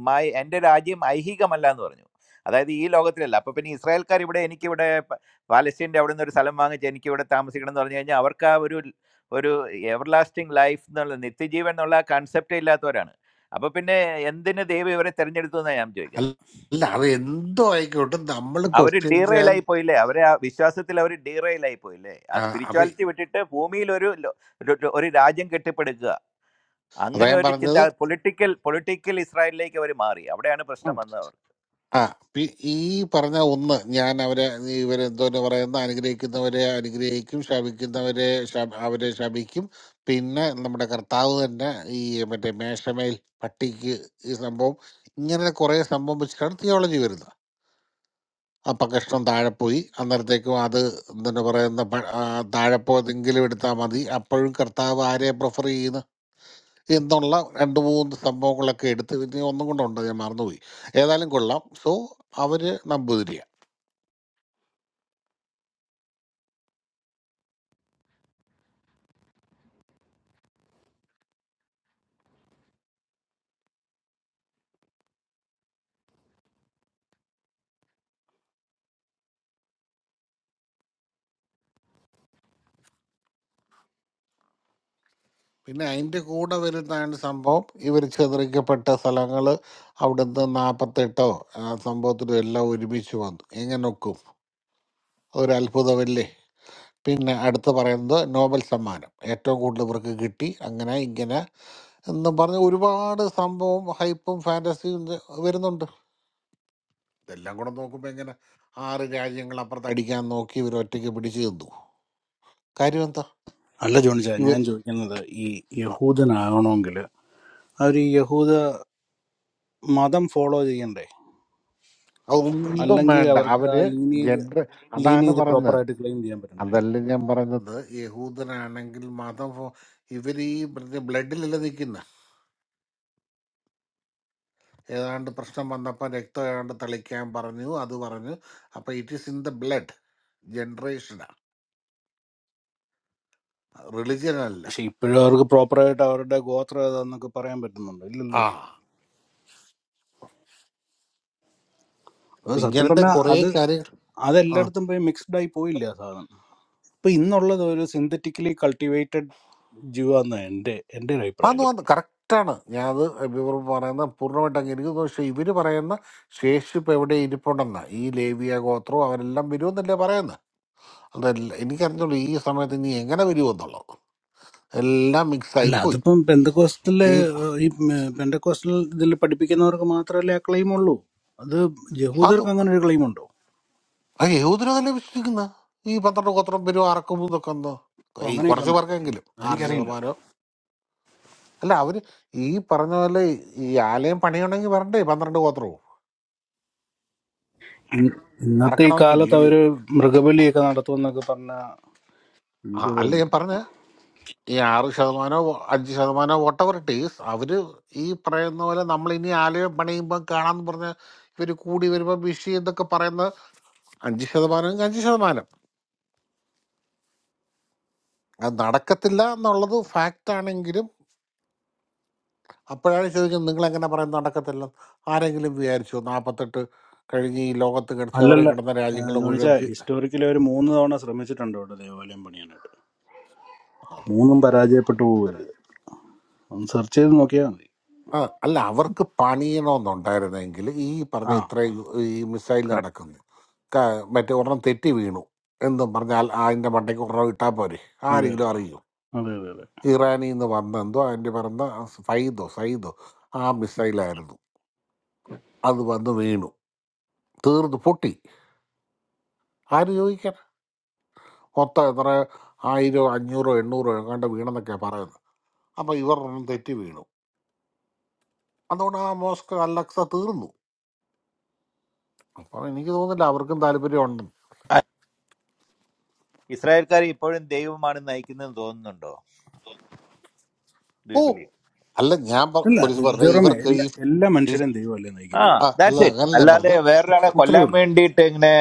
Speaker 21: മൈ എൻ്റെ രാജ്യം ഐഹികമല്ല എന്ന് പറഞ്ഞു അതായത് ഈ ലോകത്തിലല്ല അപ്പൊ പിന്നെ ഇസ്രായേൽക്കാർ ഇവിടെ എനിക്കിവിടെ പ- പാലസ്തീൻ്റെ അവിടെ നിന്ന് ഒരു സ്ഥലം വാങ്ങിച്ച് എനിക്ക് ഇവിടെ താമസിക്കണം എന്ന് പറഞ്ഞു കഴിഞ്ഞാൽ അവർക്ക് ആ ഒരു ഒരു എവർലാസ്റ്റിംഗ് ലൈഫ് എന്നുള്ള നിത്യജീവൻ എന്നുള്ള കൺസെപ്റ്റേ ഇല്ലാത്തവരാണ് അപ്പൊ പിന്നെ എന്തിന് ദൈവം ഇവരെ തെരഞ്ഞെടുത്തു എന്നാണ് ഞാൻ ചോദിക്കുന്നത്
Speaker 11: അല്ല അല്ല, അത് എന്തോ ആയിക്കോട്ടെ നമ്മൾ
Speaker 21: അവർ
Speaker 11: ക്വസ്റ്റ്യൻ ചെയ്യാൻ
Speaker 21: ഡീറെയിലായി പോയില്ലേ അവരെ ആ വിശ്വാസത്തിൽ അവർ ഡീറെയിലായി പോയില്ലേ ആ
Speaker 11: ആ, അപ്പൊ
Speaker 21: സ്പിരിച്വാലിറ്റി വിട്ടിട്ട് ഭൂമിയിൽ ഒരു ലോ- ഒരു ഒരു രാജ്യം കെട്ടിപ്പടുക്കുക
Speaker 11: അതാ
Speaker 21: അങ്ങനെ
Speaker 11: ഞാൻ
Speaker 21: ഒരു ചിന്ത
Speaker 11: പറഞ്ഞത്
Speaker 21: പൊളിറ്റിക്കൽ പൊളിറ്റിക്കൽ ഇസ്രായേലിലേക്ക് അവർ മാറി അവിടെയാണ് പ്രശ്നം വന്നത്
Speaker 11: ആ പി- ഈ പറഞ്ഞ ഒന്ന് ഞാൻ അവരെ ഇവരെന്തോന്ന് പറയുന്ന അനുഗ്രഹിക്കുന്നവരെ അനുഗ്രഹിക്കും ശപിക്കുന്നവരെ ശപ- അവരെ ശപിക്കും പിന്നെ നമ്മുടെ കർത്താവ് തന്നെ ഈ മറ്റേ മേശമേൽ പട്ടിക്ക് ഈ സംഭവം ഇങ്ങനെ കുറേ സംഭവം വെച്ചിട്ടാണ് തിയോളജി വരുന്നത് അപ്പം കഷ്ണം താഴെ പോയി അന്നേരത്തേക്കും അത് എന്താണ് പറയുന്ന പ- ആ, താഴെ പോയതെങ്കിലും എടുത്താൽ മതി അപ്പോഴും കർത്താവ് ആരെ പ്രിഫർ ചെയ്യുന്നു എന്നുള്ള രണ്ട് മൂന്ന് സംഭവങ്ങളൊക്കെ എടുത്ത് പിന്നെ ഒന്നും കൊണ്ടുണ്ട് ഞാൻ മറന്നുപോയി ഏതായാലും കൊള്ളാം സോ അവര് നമ്പൂതിരിയാണ് പിന്നെ അതിൻ്റെ കൂടെ വരുന്നതാണ് സംഭവം ഇവർ ചിതറിക്കപ്പെട്ട സ്ഥലങ്ങൾ അവിടുന്ന് നാൽപ്പത്തെട്ടോ ആ സംഭവത്തിലും എല്ലാം ഒരുമിച്ച് വന്നു എങ്ങനെ ഒക്കും ഒരു അത്ഭുതമല്ലേ പിന്നെ അടുത്ത് പറയുന്നത് നോബൽ സമ്മാനം ഏറ്റവും കൂടുതൽ ഇവർക്ക് കിട്ടി അങ്ങനെ ഇങ്ങനെ എന്നും പറഞ്ഞ് ഒരുപാട് സംഭവം ഹൈപ്പും ഫാൻറ്റസിയും ഇത് വരുന്നുണ്ട് ഇതെല്ലാം കൂടെ നോക്കുമ്പോൾ എങ്ങനെ ആറ് രാജ്യങ്ങൾ അപ്പുറത്ത് അടിക്കാൻ നോക്കി ഇവർ ഒറ്റയ്ക്ക് പിടിച്ചു തന്നു കാര്യം എന്താ
Speaker 28: അല്ല ജോണിച്ച
Speaker 11: ഇവർ
Speaker 28: ഞാൻ ചോദിക്കുന്നത് ഈ
Speaker 11: അ-
Speaker 28: യഹൂദനാകണമെങ്കിൽ അവർ ഈ യഹൂദ മതം ഫോളോ ചെയ്യണ്ടേ
Speaker 11: ഒന്നും
Speaker 28: അല്ലെങ്കിൽ
Speaker 11: വേണ്ട
Speaker 28: അവർക്ക് ആ
Speaker 11: അവര്
Speaker 28: ലീനിയേജ്
Speaker 11: ജനറ അതാണ്
Speaker 28: ലീനിയേജ്
Speaker 11: പറയുന്നത്
Speaker 28: പ്രോപ്പറായിട്ട് ക്ലെയിം ചെയ്യാൻ പറ്റണ്ടേ
Speaker 11: അതല്ല ഞാൻ പറയുന്നത് യഹൂദനാണെങ്കിൽ മതം ഫോ- ഇവര് ഈ ബ്ലഡിലല്ല നിൽക്കുന്ന ഏതാണ്ട് പ്രശ്നം വന്നപ്പോൾ രക്തം ഏതാണ്ട് തളിക്കാൻ പറഞ്ഞു അത് പറഞ്ഞു അപ്പൊ it is in the blood ജനറേഷനാ റിലിജിയൻ അല്ല
Speaker 28: പക്ഷെ ഇപ്പോഴും അവർക്ക് പ്രോപ്പറായിട്ട് അവരുടെ ഗോത്ര ഏതാന്നൊക്കെ പറയാൻ പറ്റുന്നുണ്ടോ
Speaker 11: ആ
Speaker 28: ഇല്ലല്ലോ
Speaker 11: അപ്പൊ
Speaker 28: അത് സത്യം
Speaker 11: ഇങ്ങനത്തെ
Speaker 28: പറഞ്ഞാൽ
Speaker 11: കുറെ
Speaker 28: അത്
Speaker 11: കാര്യങ്ങൾ ആ
Speaker 28: അതെല്ലായിടത്തും പോയി മിക്സ്ഡ് ആയി പോയില്ല ആ സാധനം ഇപ്പൊ ഇന്നുള്ളത് ഒരു സിന്തറ്റിക്കലി കൾട്ടിവേറ്റഡ് ജീവാന്ന് എൻ്റെ എൻ്റെ ഒരു അഭിപ്രായം
Speaker 11: അന്ന്
Speaker 28: കേട്ടോ
Speaker 11: വന്ന് കറക്റ്റാണ് ഞാൻ അത് ഇവർ പറയുന്ന പൂർണ്ണമായിട്ട് അങ്ങ് എനിക്ക് തോന്നുന്നു. പക്ഷെ ഇവര് പറയുന്ന ശേഷിപ്പ് എവിടെ ഇരിപ്പുണ്ടെന്ന ഈ ലേവിയ ഗോത്രവും അവരെല്ലാം വരുമെന്നല്ലേ പറയുന്നത് അതല്ല എനിക്കറിഞ്ഞുള്ളൂ ഈ സമയത്ത് ഇനി എങ്ങനെ വരുമെന്നുള്ളത് എല്ലാം മിക്സ് ആയി
Speaker 28: അല്ല
Speaker 11: പോയി
Speaker 28: അതിപ്പം പെന്തക്കോസ്റ്റലിലെ
Speaker 11: ഈ
Speaker 28: ഏഹ്, ഈ പെന്തക്കോസ്റ്റൽ ഇതിൽ പഠിപ്പിക്കുന്നവർക്ക് മാത്രമല്ലേ ആ ക്ലെയിം ഉള്ളൂ അത്
Speaker 11: അത്
Speaker 28: യഹൂദർക്ക് അങ്ങനെ ഒരു ക്ലെയിം ഉണ്ടോ
Speaker 11: ആ യഹൂദര് തന്നെ വിശ്വസിക്കുന്ന ഈ പന്ത്രണ്ട് ഗോത്രം പേരും അറക്കും ഇതൊക്കെ എന്തോ
Speaker 28: അപ്പൊ
Speaker 11: ഈ
Speaker 28: അങ്ങനെയൊക്കെ
Speaker 11: കുറച്ച്
Speaker 28: ഉണ്ടോ
Speaker 11: പേർക്കെങ്കിലും ആറ്
Speaker 28: എനിക്കറിയില്ല കേട്ടോ
Speaker 11: ശതമാനോ അല്ല അവര് ഈ പറഞ്ഞ പോലെ ഈ ആലയം പണിയണമെങ്കിൽ വരണ്ടേ പന്ത്രണ്ട് ഗോത്രവും
Speaker 28: ഇ- ഇന്നത്തെ ഈ
Speaker 11: അറക്കണമെങ്കിൽ ഈ
Speaker 28: കാലത്ത് അവര്
Speaker 11: ക-
Speaker 28: മൃഗബലിയൊക്കെ നടത്തുമെന്നൊക്കെ പറഞ്ഞ
Speaker 11: ആ-
Speaker 28: എനിക്ക്
Speaker 11: അല്ല ഞാൻ
Speaker 28: തോന്നുന്നില്ല
Speaker 11: പറഞ്ഞ ഈ ആറ് ശതമാനോ അഞ്ച് ശതമാനോ വോട്ടവർ ടീസ് അവര് ഈ പറയുന്ന പോലെ നമ്മൾ ഇനി ആലയം പണിയുമ്പോൾ കാണാന്ന് പറഞ്ഞ ഇവര് കൂടി വരുമ്പോൾ വിഷി എന്നൊക്കെ പറയുന്ന അഞ്ച് ശതമാനം അഞ്ച് ശതമാനം അത് നടക്കത്തില്ല എന്നുള്ളത് ഫാക്റ്റ് ആണെങ്കിലും അപ്പോഴാണ് ചോദിക്കുന്നത് നിങ്ങൾ എങ്ങനെ പറയുന്നത് നടക്കത്തില്ല ആരെങ്കിലും വിചാരിച്ചോ നാൽപ്പത്തെട്ട് കഴിഞ്ഞ് ഈ ലോകത്ത് കിട- ചിതറി
Speaker 28: അല്ലല്ല
Speaker 11: കിടന്ന രാജ്യങ്ങൾ
Speaker 28: ജോണിച്ച
Speaker 11: മുഴുവൻ ചി-
Speaker 28: ഹിസ്റ്റോറിക്കലി അവർ മൂന്ന് തവണ ശ്രമിച്ചിട്ടുണ്ട് ഇവിടെ ദേവാലയം പണിയാനായിട്ട് മൂന്നും പരാജയപ്പെട്ടു പോവുകയാണ് ഒന്ന് സെർച്ച് ചെയ്ത് നോക്കിയാൽ മതി
Speaker 11: ആ, അല്ല അവർക്ക് പണിയണമെന്നുണ്ടായിരുന്നെങ്കിൽ ഈ പറഞ്ഞ
Speaker 28: ആ
Speaker 11: ഇത്രയും ഈ മിസൈൽ
Speaker 28: കറക്റ്റ്
Speaker 11: നടക്കുന്നു ക- മറ്റേ ഒരെണ്ണം തെറ്റി വീണു എന്നും പറഞ്ഞാൽ അതിൻ്റെ മണ്ടയ്ക്ക് ഒരെണ്ണം ഇട്ടാൽ പോരെ
Speaker 28: അതെ
Speaker 11: ആരെങ്കിലും
Speaker 28: അതെ
Speaker 11: അറിയൂ
Speaker 28: അതെ അതെ അതെ
Speaker 11: ഇറാനിൽ നിന്ന് വന്നെന്തോ അതിൻ്റെ പറഞ്ഞ ഫൈദോ സൈദോ ആ മിസൈലായിരുന്നു അത് വന്ന് വീണു തീർന്നു പൊട്ടി ആര് ചോദിക്കാൻ മൊത്തം എത്ര ആയിരോ അഞ്ഞൂറോ എണ്ണൂറോ എങ്ങാണ്ട് വീണെന്നൊക്കെയാണ് പറയുന്നത് അപ്പോൾ ഇവർ ഒന്നും തെറ്റി വീണു അതുകൊണ്ട് ആ മോസ്ക് അലക്സ തീർന്നു അപ്പോൾ എനിക്ക് തോന്നുന്നില്ല അവർക്കും താല്പര്യം ഉണ്ടെന്ന്
Speaker 21: ഇസ്രായേൽക്കാർ ഇപ്പോഴും ദൈവമാണ് നയിക്കുന്നതെന്ന് തോന്നുന്നുണ്ടോ Do
Speaker 11: ഓ
Speaker 21: you believe?
Speaker 11: അല്ല ഞാൻ പ-
Speaker 28: അല്ല
Speaker 11: പോലീസ് പറഞ്ഞ
Speaker 28: ജെറോമേ
Speaker 11: ഇവർക്ക്
Speaker 28: എല്ലാ
Speaker 11: ഈ
Speaker 28: എല്ലാ
Speaker 11: ഈ-
Speaker 28: മനുഷ്യരെയും ദൈവമല്ലേ
Speaker 21: ആ
Speaker 28: നയിക്കുന്നത്
Speaker 11: ആ, അല്ല
Speaker 21: ദാറ്റ്സ് ഇറ്റ്
Speaker 11: അങ്ങനല്ല ഞാൻ
Speaker 21: അല്ലാതെ
Speaker 11: പറഞ്ഞ
Speaker 21: വേറൊരാളെ
Speaker 28: അത്രേ
Speaker 21: കൊല്ലാൻ
Speaker 28: ഉള്ളൂ
Speaker 21: വേണ്ടിയിട്ട് ഇങ്ങനെ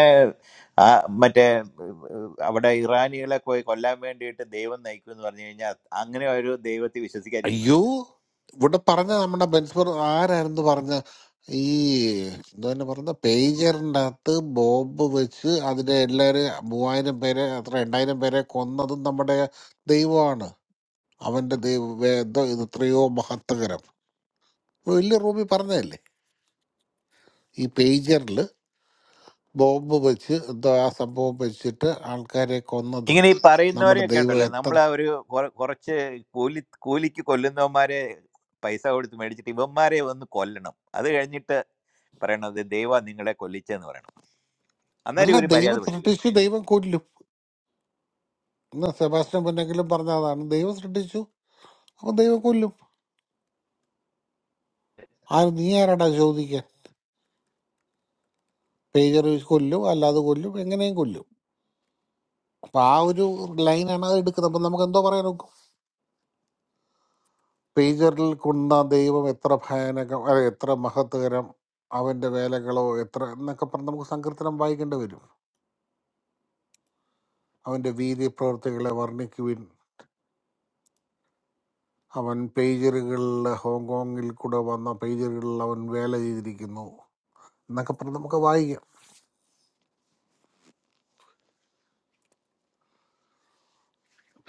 Speaker 21: ആ, മറ്റേ ഉം, അവിടെ ഇറാനികളെ പോയി കൊല്ലാൻ വേണ്ടിയിട്ട് ദൈവം നയിക്കും എന്ന് പറഞ്ഞു കഴിഞ്ഞാൽ അങ്ങനെ ഒരു ദൈവത്തെ വിശ്വസിക്കാതിരിക്കുന്നത്
Speaker 11: അയ്യോ
Speaker 21: നല്ലത്.
Speaker 11: ഇവിടെ പറഞ്ഞ നമ്മുടെ ബെൻസ്ബർ ആരായിരുന്നു പറഞ്ഞ ഈ എന്താ തന്നെ പറഞ്ഞ പേജറിൻ്റെ അകത്ത് ബോംബ് വെച്ച് അതിലെ എല്ലാവരും മൂവായിരം പേരെ അത്ര രണ്ടായിരം പേരെ കൊന്നതും നമ്മുടെ ദൈവമാണ് അവൻ്റെ ദൈവം എന്തോ ഇത് എത്രയോ മഹത്വകരം വലിയ റൂമിൽ പറഞ്ഞതല്ലേ ഈ പേജറിൽ ബോംബ് വെച്ച് എന്തോ ആ സംഭവം വെച്ചിട്ട് ആൾക്കാരെ കൊന്നത്
Speaker 21: ഇങ്ങനെ ഈ
Speaker 11: നമ്മുടെ
Speaker 21: പറയുന്നവരെയൊക്കെ
Speaker 11: ദൈവം
Speaker 21: ഉണ്ടല്ലോ
Speaker 11: എത്ര
Speaker 21: നമ്മൾ ആ ഒരു കുറ- കുറച്ച് കൂലി കൂലിക്ക് കൊല്ലുന്നവന്മാരെ പൈസ കൊടുത്ത് മേടിച്ചിട്ട് ഇവന്മാരെ ഒന്ന് കൊല്ലണം അത് കഴിഞ്ഞിട്ട് പറയണത് ദൈവ നിങ്ങളെ കൊല്ലിച്ചെന്ന് പറയണം
Speaker 11: അല്ല
Speaker 21: അന്നേരം ഒരു മര്യാദ
Speaker 11: ദൈവം
Speaker 21: പഠിക്കും
Speaker 11: സൃഷ്ടിച്ചു ദൈവം കൊല്ലും ഇന്ന് സെബാസ്റ്റ്യൻ പൊന്നെങ്കിലും പറഞ്ഞതാണ് ദൈവം സൃഷ്ടിച്ചു അപ്പൊ ദൈവം കൊല്ലും ആ നീ ആരാടാ ചോദിക്കാൻ പേജർ വെച്ച് കൊല്ലും അല്ലാതെ കൊല്ലും എങ്ങനെയും കൊല്ലും അപ്പൊ ആ ഒരു ലൈനാണ് അത് എടുക്കുന്നത് അപ്പൊ നമുക്ക് എന്തോ പറയാൻ നോക്കും പേജറിൽ കൊണ്ട ദൈവം എത്ര ഭയാനകം അതെ എത്ര മഹത്കരം അവന്റെ വേലകളോ എത്ര എന്നൊക്കെ പറഞ്ഞ് നമുക്ക് സങ്കീർത്തനം വായിക്കേണ്ടി വരും അവന്റെ വീതി പ്രവൃത്തികളെ വർണ്ണിക്കുവിൻ അവൻ പേജറുകളിൽ ഹോങ്കോങ്ങിൽ കൂടെ വന്ന പേജറുകളിൽ അവൻ വേല ചെയ്തിരിക്കുന്നു എന്നൊക്കെ പറഞ്ഞ് നമുക്ക് വായിക്കാം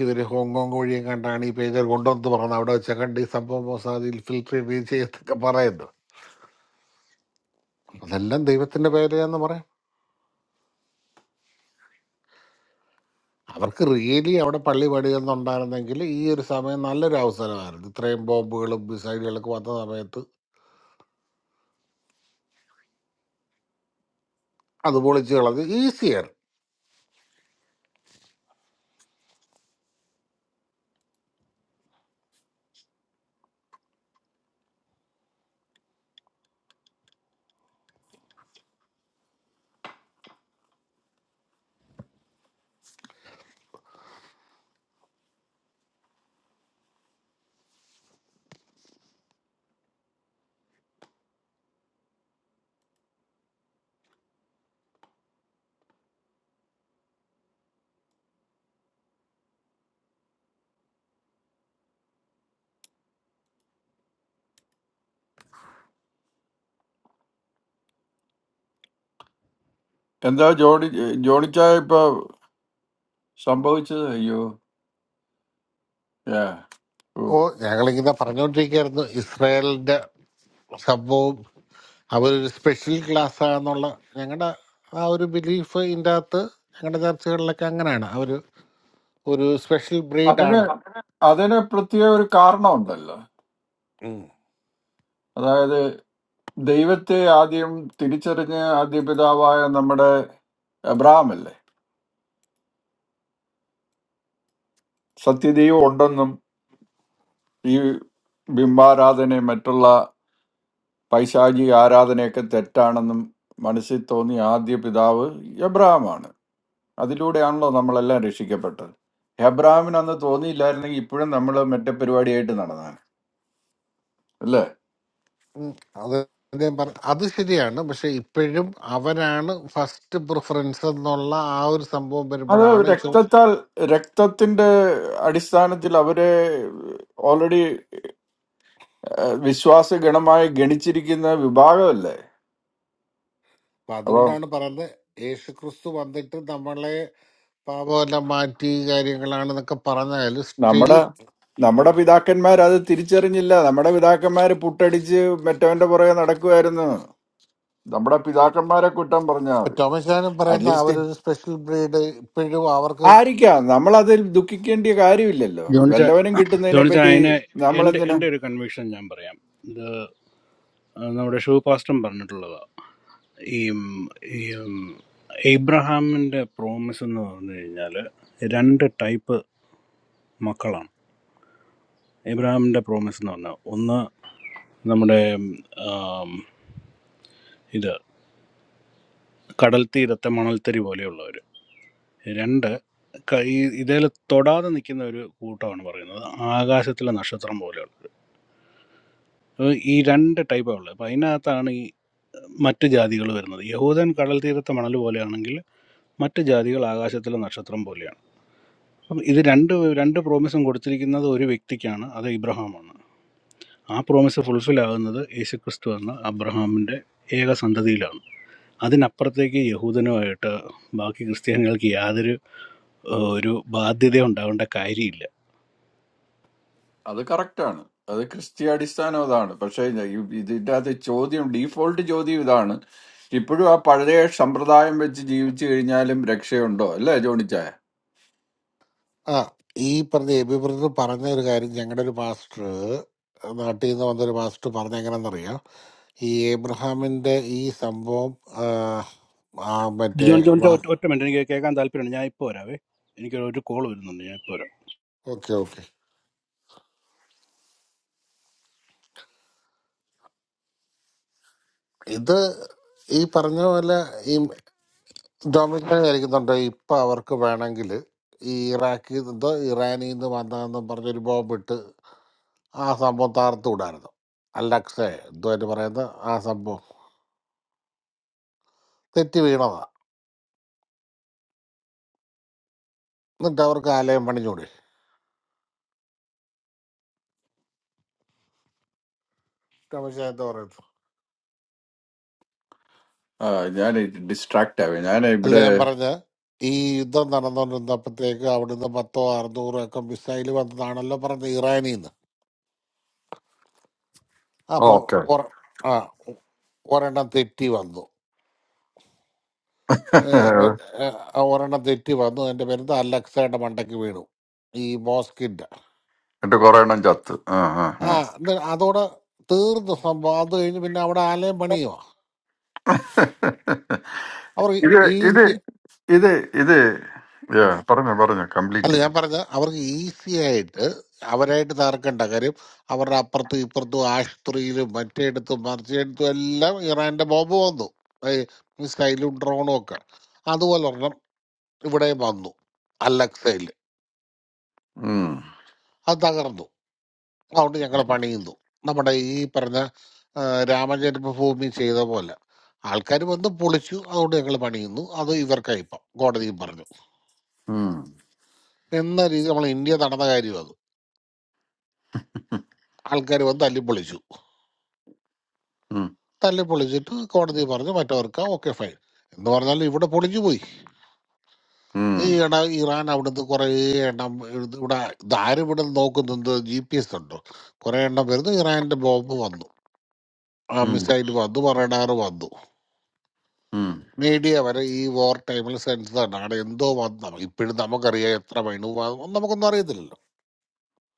Speaker 11: ഇവര് ഹോങ്കോങ് വഴിയെ കണ്ടാണ് ഈ പേജർ കൊണ്ടുവന്ന് പറഞ്ഞത് അവിടെ വെച്ച കണ്ട് ഈ സംഭവം മൊസാദിൽ ഫിൽറ്റർ റീച്ച് ചെയ്തൊക്കെ പറയുന്നു അപ്പൊ അതെല്ലാം ദൈവത്തിന്റെ പേരെന്ന് പറയാം അവർക്ക് റിയലി അവിടെ പള്ളി പണിയെന്നുണ്ടായിരുന്നെങ്കിൽ ഈ ഒരു സമയം നല്ലൊരു അവസരമായിരുന്നു ഇത്രയും ബോംബുകളും മിസൈലുകളൊക്കെ വന്ന സമയത്ത് അത് പൊളിച്ചു കളഞ്ഞ് ഈസിയായിരുന്നു
Speaker 14: എന്താ ജോണി ജോണിച്ചായ ഇപ്പൊ സംഭവിച്ചത് അയ്യോ ഏ, ഓ.
Speaker 11: ഓ ഞങ്ങളിങ്ങനെ പറഞ്ഞുകൊണ്ടിരിക്കുകയായിരുന്നു ഇസ്രായേലിന്റെ സംഭവം അവരൊരു സ്പെഷ്യൽ ക്ലാസ് ആണെന്നുള്ള ഞങ്ങളുടെ ആ ഒരു ബിലീഫ് ഇതിൻ്റെ അകത്ത് ഞങ്ങളുടെ ചർച്ചകളിലൊക്കെ അങ്ങനെയാണ് അവർ ഒരു സ്പെഷ്യൽ
Speaker 14: അതിന്
Speaker 11: ബ്രീഡാണ്
Speaker 14: അതിന് പ്രത്യേക ഒരു കാരണമുണ്ടല്ലോ അതായത് ദൈവത്തെ ആദ്യം തിരിച്ചറിഞ്ഞ ആദ്യ പിതാവായ നമ്മുടെ അബ്രഹാം അല്ലേ സത്യദൈവം ഉണ്ടെന്നും ഈ ബിംബാരാധന മറ്റുള്ള പൈശാചിക ആരാധനയൊക്കെ തെറ്റാണെന്നും മനസ്സിൽ തോന്നിയ ആദ്യ പിതാവ് എബ്രഹാമാണ് അതിലൂടെയാണല്ലോ നമ്മളെല്ലാം രക്ഷിക്കപ്പെട്ടത് എബ്രഹാമിന് അന്ന് തോന്നിയില്ലായിരുന്നെങ്കിൽ ഇപ്പോഴും നമ്മൾ മറ്റേ പരിപാടിയായിട്ട് നടന്നാണ് അല്ലേ
Speaker 11: അത് ഞാൻ പറ അത് ശരിയാണ് പക്ഷെ ഇപ്പോഴും അവരാണ് ഫസ്റ്റ് പ്രിഫറൻസ് എന്നുള്ള ആ ഒരു സംഭവം
Speaker 14: അത്
Speaker 11: വരുമ്പോഴാണ് ഇച്ചു
Speaker 14: രക്തത്താൽ രക്തത്തിന്റെ അടിസ്ഥാനത്തിൽ അവരെ ഓൾറെഡി വിശ്വാസ ഗണമായി ഗണിച്ചിരിക്കുന്ന വിഭാഗമല്ലേ
Speaker 11: അപ്പൊ
Speaker 14: അപ്പൊ
Speaker 11: അതുകൊണ്ടാണ് പറയുന്നത് യേശു ക്രിസ്തു വന്നിട്ട് നമ്മളെ പാപമെല്ലാം മാറ്റി കാര്യങ്ങളാണ് എന്നൊക്കെ പറഞ്ഞാൽ സ്റ്റിൽ
Speaker 14: നമ്മുടെ നമ്മുടെ പിതാക്കന്മാർ അത് തിരിച്ചറിഞ്ഞില്ല നമ്മുടെ പിതാക്കന്മാർ പുട്ടടിച്ച് മറ്റവന്റെ പുറകെ നടക്കുമായിരുന്നു നമ്മുടെ പിതാക്കന്മാരെ കുറ്റം പറഞ്ഞാൽ മതി
Speaker 11: ടോമസ് ചാനും പറയുന്ന
Speaker 14: അറ്റ്ലീസ്റ്റ്
Speaker 11: അവരൊരു സ്പെഷ്യൽ ബ്രീഡ് ഇപ്പോഴും അവർക്ക്
Speaker 14: ആയിരിക്കാം നമ്മൾ അതിൽ ദുഃഖിക്കേണ്ട കാര്യമില്ലല്ലോ
Speaker 28: ജോണിച്ച
Speaker 14: വല്ലവനും കിട്ടുന്നതിനെ
Speaker 28: ജോണിച്ച
Speaker 14: പറ്റി
Speaker 28: അതിനെ എൻ്റെ
Speaker 14: നമ്മളെന്തിനാ
Speaker 28: എൻ്റെ ഒരു കൺവിക്ഷൻ ഞാൻ പറയാം ഇത് നമ്മുടെ ഷൂ പാസ്റ്റം പറഞ്ഞിട്ടുള്ളതാ ഈ ഈ ഇബ്രഹാമിൻ്റെ പ്രോമിസ് എന്ന് പറഞ്ഞു കഴിഞ്ഞാൽ രണ്ട് ടൈപ്പ് മക്കളാണ് ഇബ്രഹാമിൻ്റെ പ്രോമിസ് എന്ന് പറഞ്ഞാൽ ഒന്ന് നമ്മുടെ ഉം, ആം, ഇത് കടൽ തീരത്തെ മണൽത്തരി പോലെയുള്ളവർ രണ്ട് ക- ഈ ഇതേൽ തൊടാതെ നിൽക്കുന്ന ഒരു കൂട്ടമാണ് പറയുന്നത് ആകാശത്തിലെ നക്ഷത്രം പോലെയുള്ളത് അപ്പൊ ഈ രണ്ട് ടൈപ്പാണ് ഉള്ളത് അപ്പം അതിനകത്താണ് ഈ മറ്റ് ജാതികൾ വരുന്നത് യഹൂദൻ കടൽ തീരത്തെ മണൽ പോലെയാണെങ്കിൽ മറ്റ് ജാതികൾ ആകാശത്തിലെ നക്ഷത്രം പോലെയാണ് അപ്പം ഇത് രണ്ട് രണ്ട് പ്രോമിസും കൊടുത്തിരിക്കുന്നത് ഒരു വ്യക്തിക്കാണ് അത് ഇബ്രഹാമാണ് ആ പ്രോമിസ് ഫുൾഫിൽ ആകുന്നത് യേശുക്രിസ്തു എന്ന അബ്രഹാമിൻ്റെ ഏക സന്തതിയിലാണ് അതിനപ്പുറത്തേക്ക് യഹൂദനുമായിട്ട് ബാക്കി ക്രിസ്ത്യാനികൾക്ക് യാതൊരു ഏഹ്, ഒരു ബാധ്യത ഉണ്ടാവേണ്ട കാര്യമില്ല
Speaker 14: അത് കറക്റ്റാണ് അത് ക്രിസ്തീയ അടിസ്ഥാനം അതാണ് പക്ഷേ ഇ- ഇതിന്റെ അകത്ത് ചോദ്യം ഡീഫോൾട്ട് ചോദ്യം ഇതാണ് ഇപ്പോഴും ആ പഴയ സമ്പ്രദായം വെച്ച് ജീവിച്ചു കഴിഞ്ഞാലും രക്ഷയുണ്ടോ അല്ലേ ജോണിച്ചായ
Speaker 11: ആ ഈ പറഞ്ഞ എബി ബ്രദർ പറഞ്ഞ ഒരു കാര്യം ഞങ്ങളുടെ ഒരു മാസ്റ്റർ നാട്ടിൽ നിന്ന് വന്നൊരു മാസ്റ്റർ പറഞ്ഞ എങ്ങനെയെന്നറിയാം ഈ ഏബ്രഹാമിന്റെ ഈ സംഭവം ആ, ആ, മറ്റേ
Speaker 28: ജോൺ ജോൺ ചോ- ഒറ്റ ഒറ്റ മിനിറ്റ് എനിക്ക് കേൾക്കാൻ താല്പര്യമുണ്ട് ഞാൻ ഇപ്പോൾ വരാവേ എനിക്ക് ഒരു കോൾ വരുന്നുണ്ട് ഞാൻ ഇപ്പോൾ വരാം
Speaker 11: ഓക്കെ ഓക്കെ ഇത് ഈ പറഞ്ഞ പോലെ ഈ ഡൊമിനിക് വിചാരിക്കുന്നുണ്ട് ഇപ്പൊ അവർക്ക് വേണമെങ്കിൽ ഈ ഇറാഖിൽ നിന്നോ ഇറാനിൽ നിന്ന് വന്നതെന്നും പറഞ്ഞൊരു ബോംബ് ഇട്ട് ആ സംഭവം താർത്തു വിടായിരുന്നു അല്ലക്സേ എന്തോ അതിന് പറയുന്നത് ആ സംഭവം തെറ്റി വീണതാ എന്നിട്ട് അവർക്ക് ആലയം പണിഞ്ഞൂടെ തമാശ എന്താ പറയുന്നത്
Speaker 14: ആ ഞാൻ ഡിസ്ട്രാക്ട് ആവേ ഞാൻ
Speaker 11: അല്ല
Speaker 14: ഇവിടെ
Speaker 11: ഞാൻ പറഞ്ഞ ഈ യുദ്ധം നടന്നുകൊണ്ടിരുന്നപ്പോഴത്തേക്ക് അവിടുന്ന് പത്തോ അറുന്നൂറോ ഒക്കെ മിസൈൽ വന്നതാണല്ലോ പറഞ്ഞ ഇറാനിൽ നിന്ന് അപ്പൊ
Speaker 14: ഓക്കെ
Speaker 11: ഒര- ആ ഒ- ഒരെണ്ണം തെറ്റി വന്നു ഏ, മ- ഏ, ആ ഒരെണ്ണം തെറ്റി വന്നു എന്റെ പേരുന്ന അലക്സയുടെ മണ്ടയ്ക്ക് വീണു ഈ മോസ്കിന്റെ
Speaker 14: എന്റെ കുറെ എണ്ണം ചത്ത് ആ ആ
Speaker 11: ആ
Speaker 14: ആ.
Speaker 11: ഇത് അതോടെ തീർന്നു സംഭവം അത് കഴിഞ്ഞ് പിന്നെ അവിടെ ആലയം പണിയുവാ അവർ
Speaker 14: ഇത് ഇത്
Speaker 11: ഈസി
Speaker 14: ഇത് ഇത് yeah, പറഞ്ഞോ പറഞ്ഞോ
Speaker 11: അല്ല
Speaker 14: കംപ്ലീറ്റ്
Speaker 11: ഞാൻ
Speaker 14: ചെയ്യും
Speaker 11: പറഞ്ഞ അവർക്ക് ഈസി ആയിട്ട് അവരായിട്ട് തകർക്കേണ്ട കാര്യം അവരുടെ അപ്പുറത്തും ഇപ്പുറത്തും ആശുപത്രിയിലും മറ്റേടത്തും മറിച്ചയിടത്തും എല്ലാം ഇറാന്റെ ബോംബ് വന്നു ഏയ് മിസൈലും ഡ്രോണും ഒക്കെ അതുപോലെ ഒരെണ്ണം ഇവിടെ വന്നു അലക്സയിൽ
Speaker 14: ഉം,
Speaker 11: അത് തകർന്നു അതുകൊണ്ട് ഞങ്ങൾ പണിയുന്നു നമ്മുടെ ഈ പറഞ്ഞ ആ, രാമജന്മഭൂമി ചെയ്ത പോലെ ആൾക്കാർ വന്ന് പൊളിച്ചു അതുകൊണ്ട് ഞങ്ങൾ പണിയുന്നു അത് ഇവർക്കായിപ്പം കോടതിയും പറഞ്ഞു
Speaker 14: ഉം,
Speaker 11: എന്ന രീതി നമ്മൾ ഇന്ത്യ നടന്ന കാര്യം അത്
Speaker 14: ഉം,
Speaker 11: ആൾക്കാർ വന്ന് തല്ലി പൊളിച്ചു
Speaker 14: ഉം,
Speaker 11: തല്ലി പൊളിച്ചിട്ട് കോടതി പറഞ്ഞു മറ്റവർക്ക് ഓക്കെ ഫൈൻ എന്ന് പറഞ്ഞാൽ ഇവിടെ പൊളിഞ്ഞു പോയി ഈ ഇട ഇറാൻ അവിടുന്ന് കുറേ എണ്ണം ഇത് ഇവിടെ ഇതാരും ഇവിടെ നോക്കുന്നുണ്ട് ജി പി എസ് ഉണ്ടോ കുറേ എണ്ണം വരുന്നു ഇറാൻ്റെ ബോംബ് വന്നു ആ
Speaker 14: ഉം,
Speaker 11: മിസൈൽ വന്നു റഡാർ വന്നു
Speaker 14: ഉം,
Speaker 11: മീഡിയ വരെ ഈ വോർ ടൈമിൽ സെൻസ് തന്നെ അവിടെ എന്തോ വന്നു ഇപ്പോഴും നമുക്കറിയാം എത്ര മൈണു നമുക്കൊന്നും അറിയത്തില്ലല്ലോ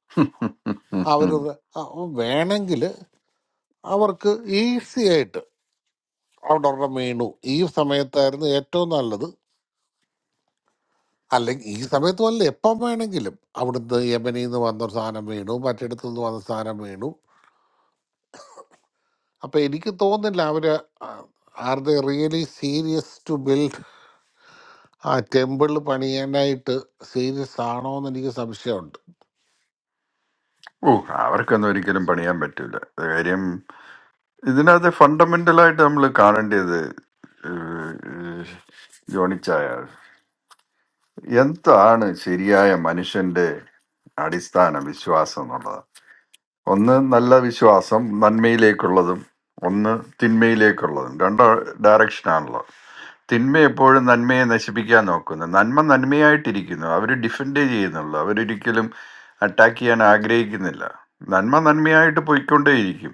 Speaker 11: അവർ
Speaker 14: ഉം.
Speaker 11: വേണമെങ്കിൽ അവർക്ക് ഈസി ആയിട്ട് അവിടെ ഒരെണ്ണം വീണു ഈ സമയത്തായിരുന്നു ഏറ്റവും നല്ലത് അല്ലെങ്കിൽ ഈ സമയത്ത് വല്ല എപ്പം വേണമെങ്കിലും അവിടുന്ന് യമനിൽ നിന്ന് വന്നൊരു സാധനം വീണു മറ്റിടത്തു നിന്ന് വന്ന സാധനം വീണു അപ്പം എനിക്ക് തോന്നുന്നില്ല അവർ are the really serious to build a temple പണിയാനായിട്ട് സീരിയസ് ആണോ എന്ന് എനിക്ക് സംശയമുണ്ട്
Speaker 14: ഓ അവർക്കൊന്നും ഒരിക്കലും പണിയാൻ പറ്റൂല അത് കാര്യം ഇതിനകത്ത് ഫണ്ടമെന്റലായിട്ട് നമ്മൾ കാണേണ്ടത് ഏഹ്, ജോണിച്ചായ എന്താണ് ശരിയായ മനുഷ്യന്റെ അടിസ്ഥാന വിശ്വാസം എന്നുള്ളത് ഒന്ന് നല്ല വിശ്വാസം നന്മയിലേക്കുള്ളതും ഒന്ന് തിന്മയിലേക്കുള്ളതും രണ്ടോ ഡയറക്ഷനാണല്ലോ തിന്മ എപ്പോഴും നന്മയെ നശിപ്പിക്കാൻ നോക്കുന്നു നന്മ നന്മയായിട്ടിരിക്കുന്നു അവർ ഡിഫെൻഡ് ചെയ്യുന്നുള്ളൂ അവരൊരിക്കലും അറ്റാക്ക് ചെയ്യാൻ ആഗ്രഹിക്കുന്നില്ല നന്മ നന്മയായിട്ട് പോയിക്കൊണ്ടേയിരിക്കും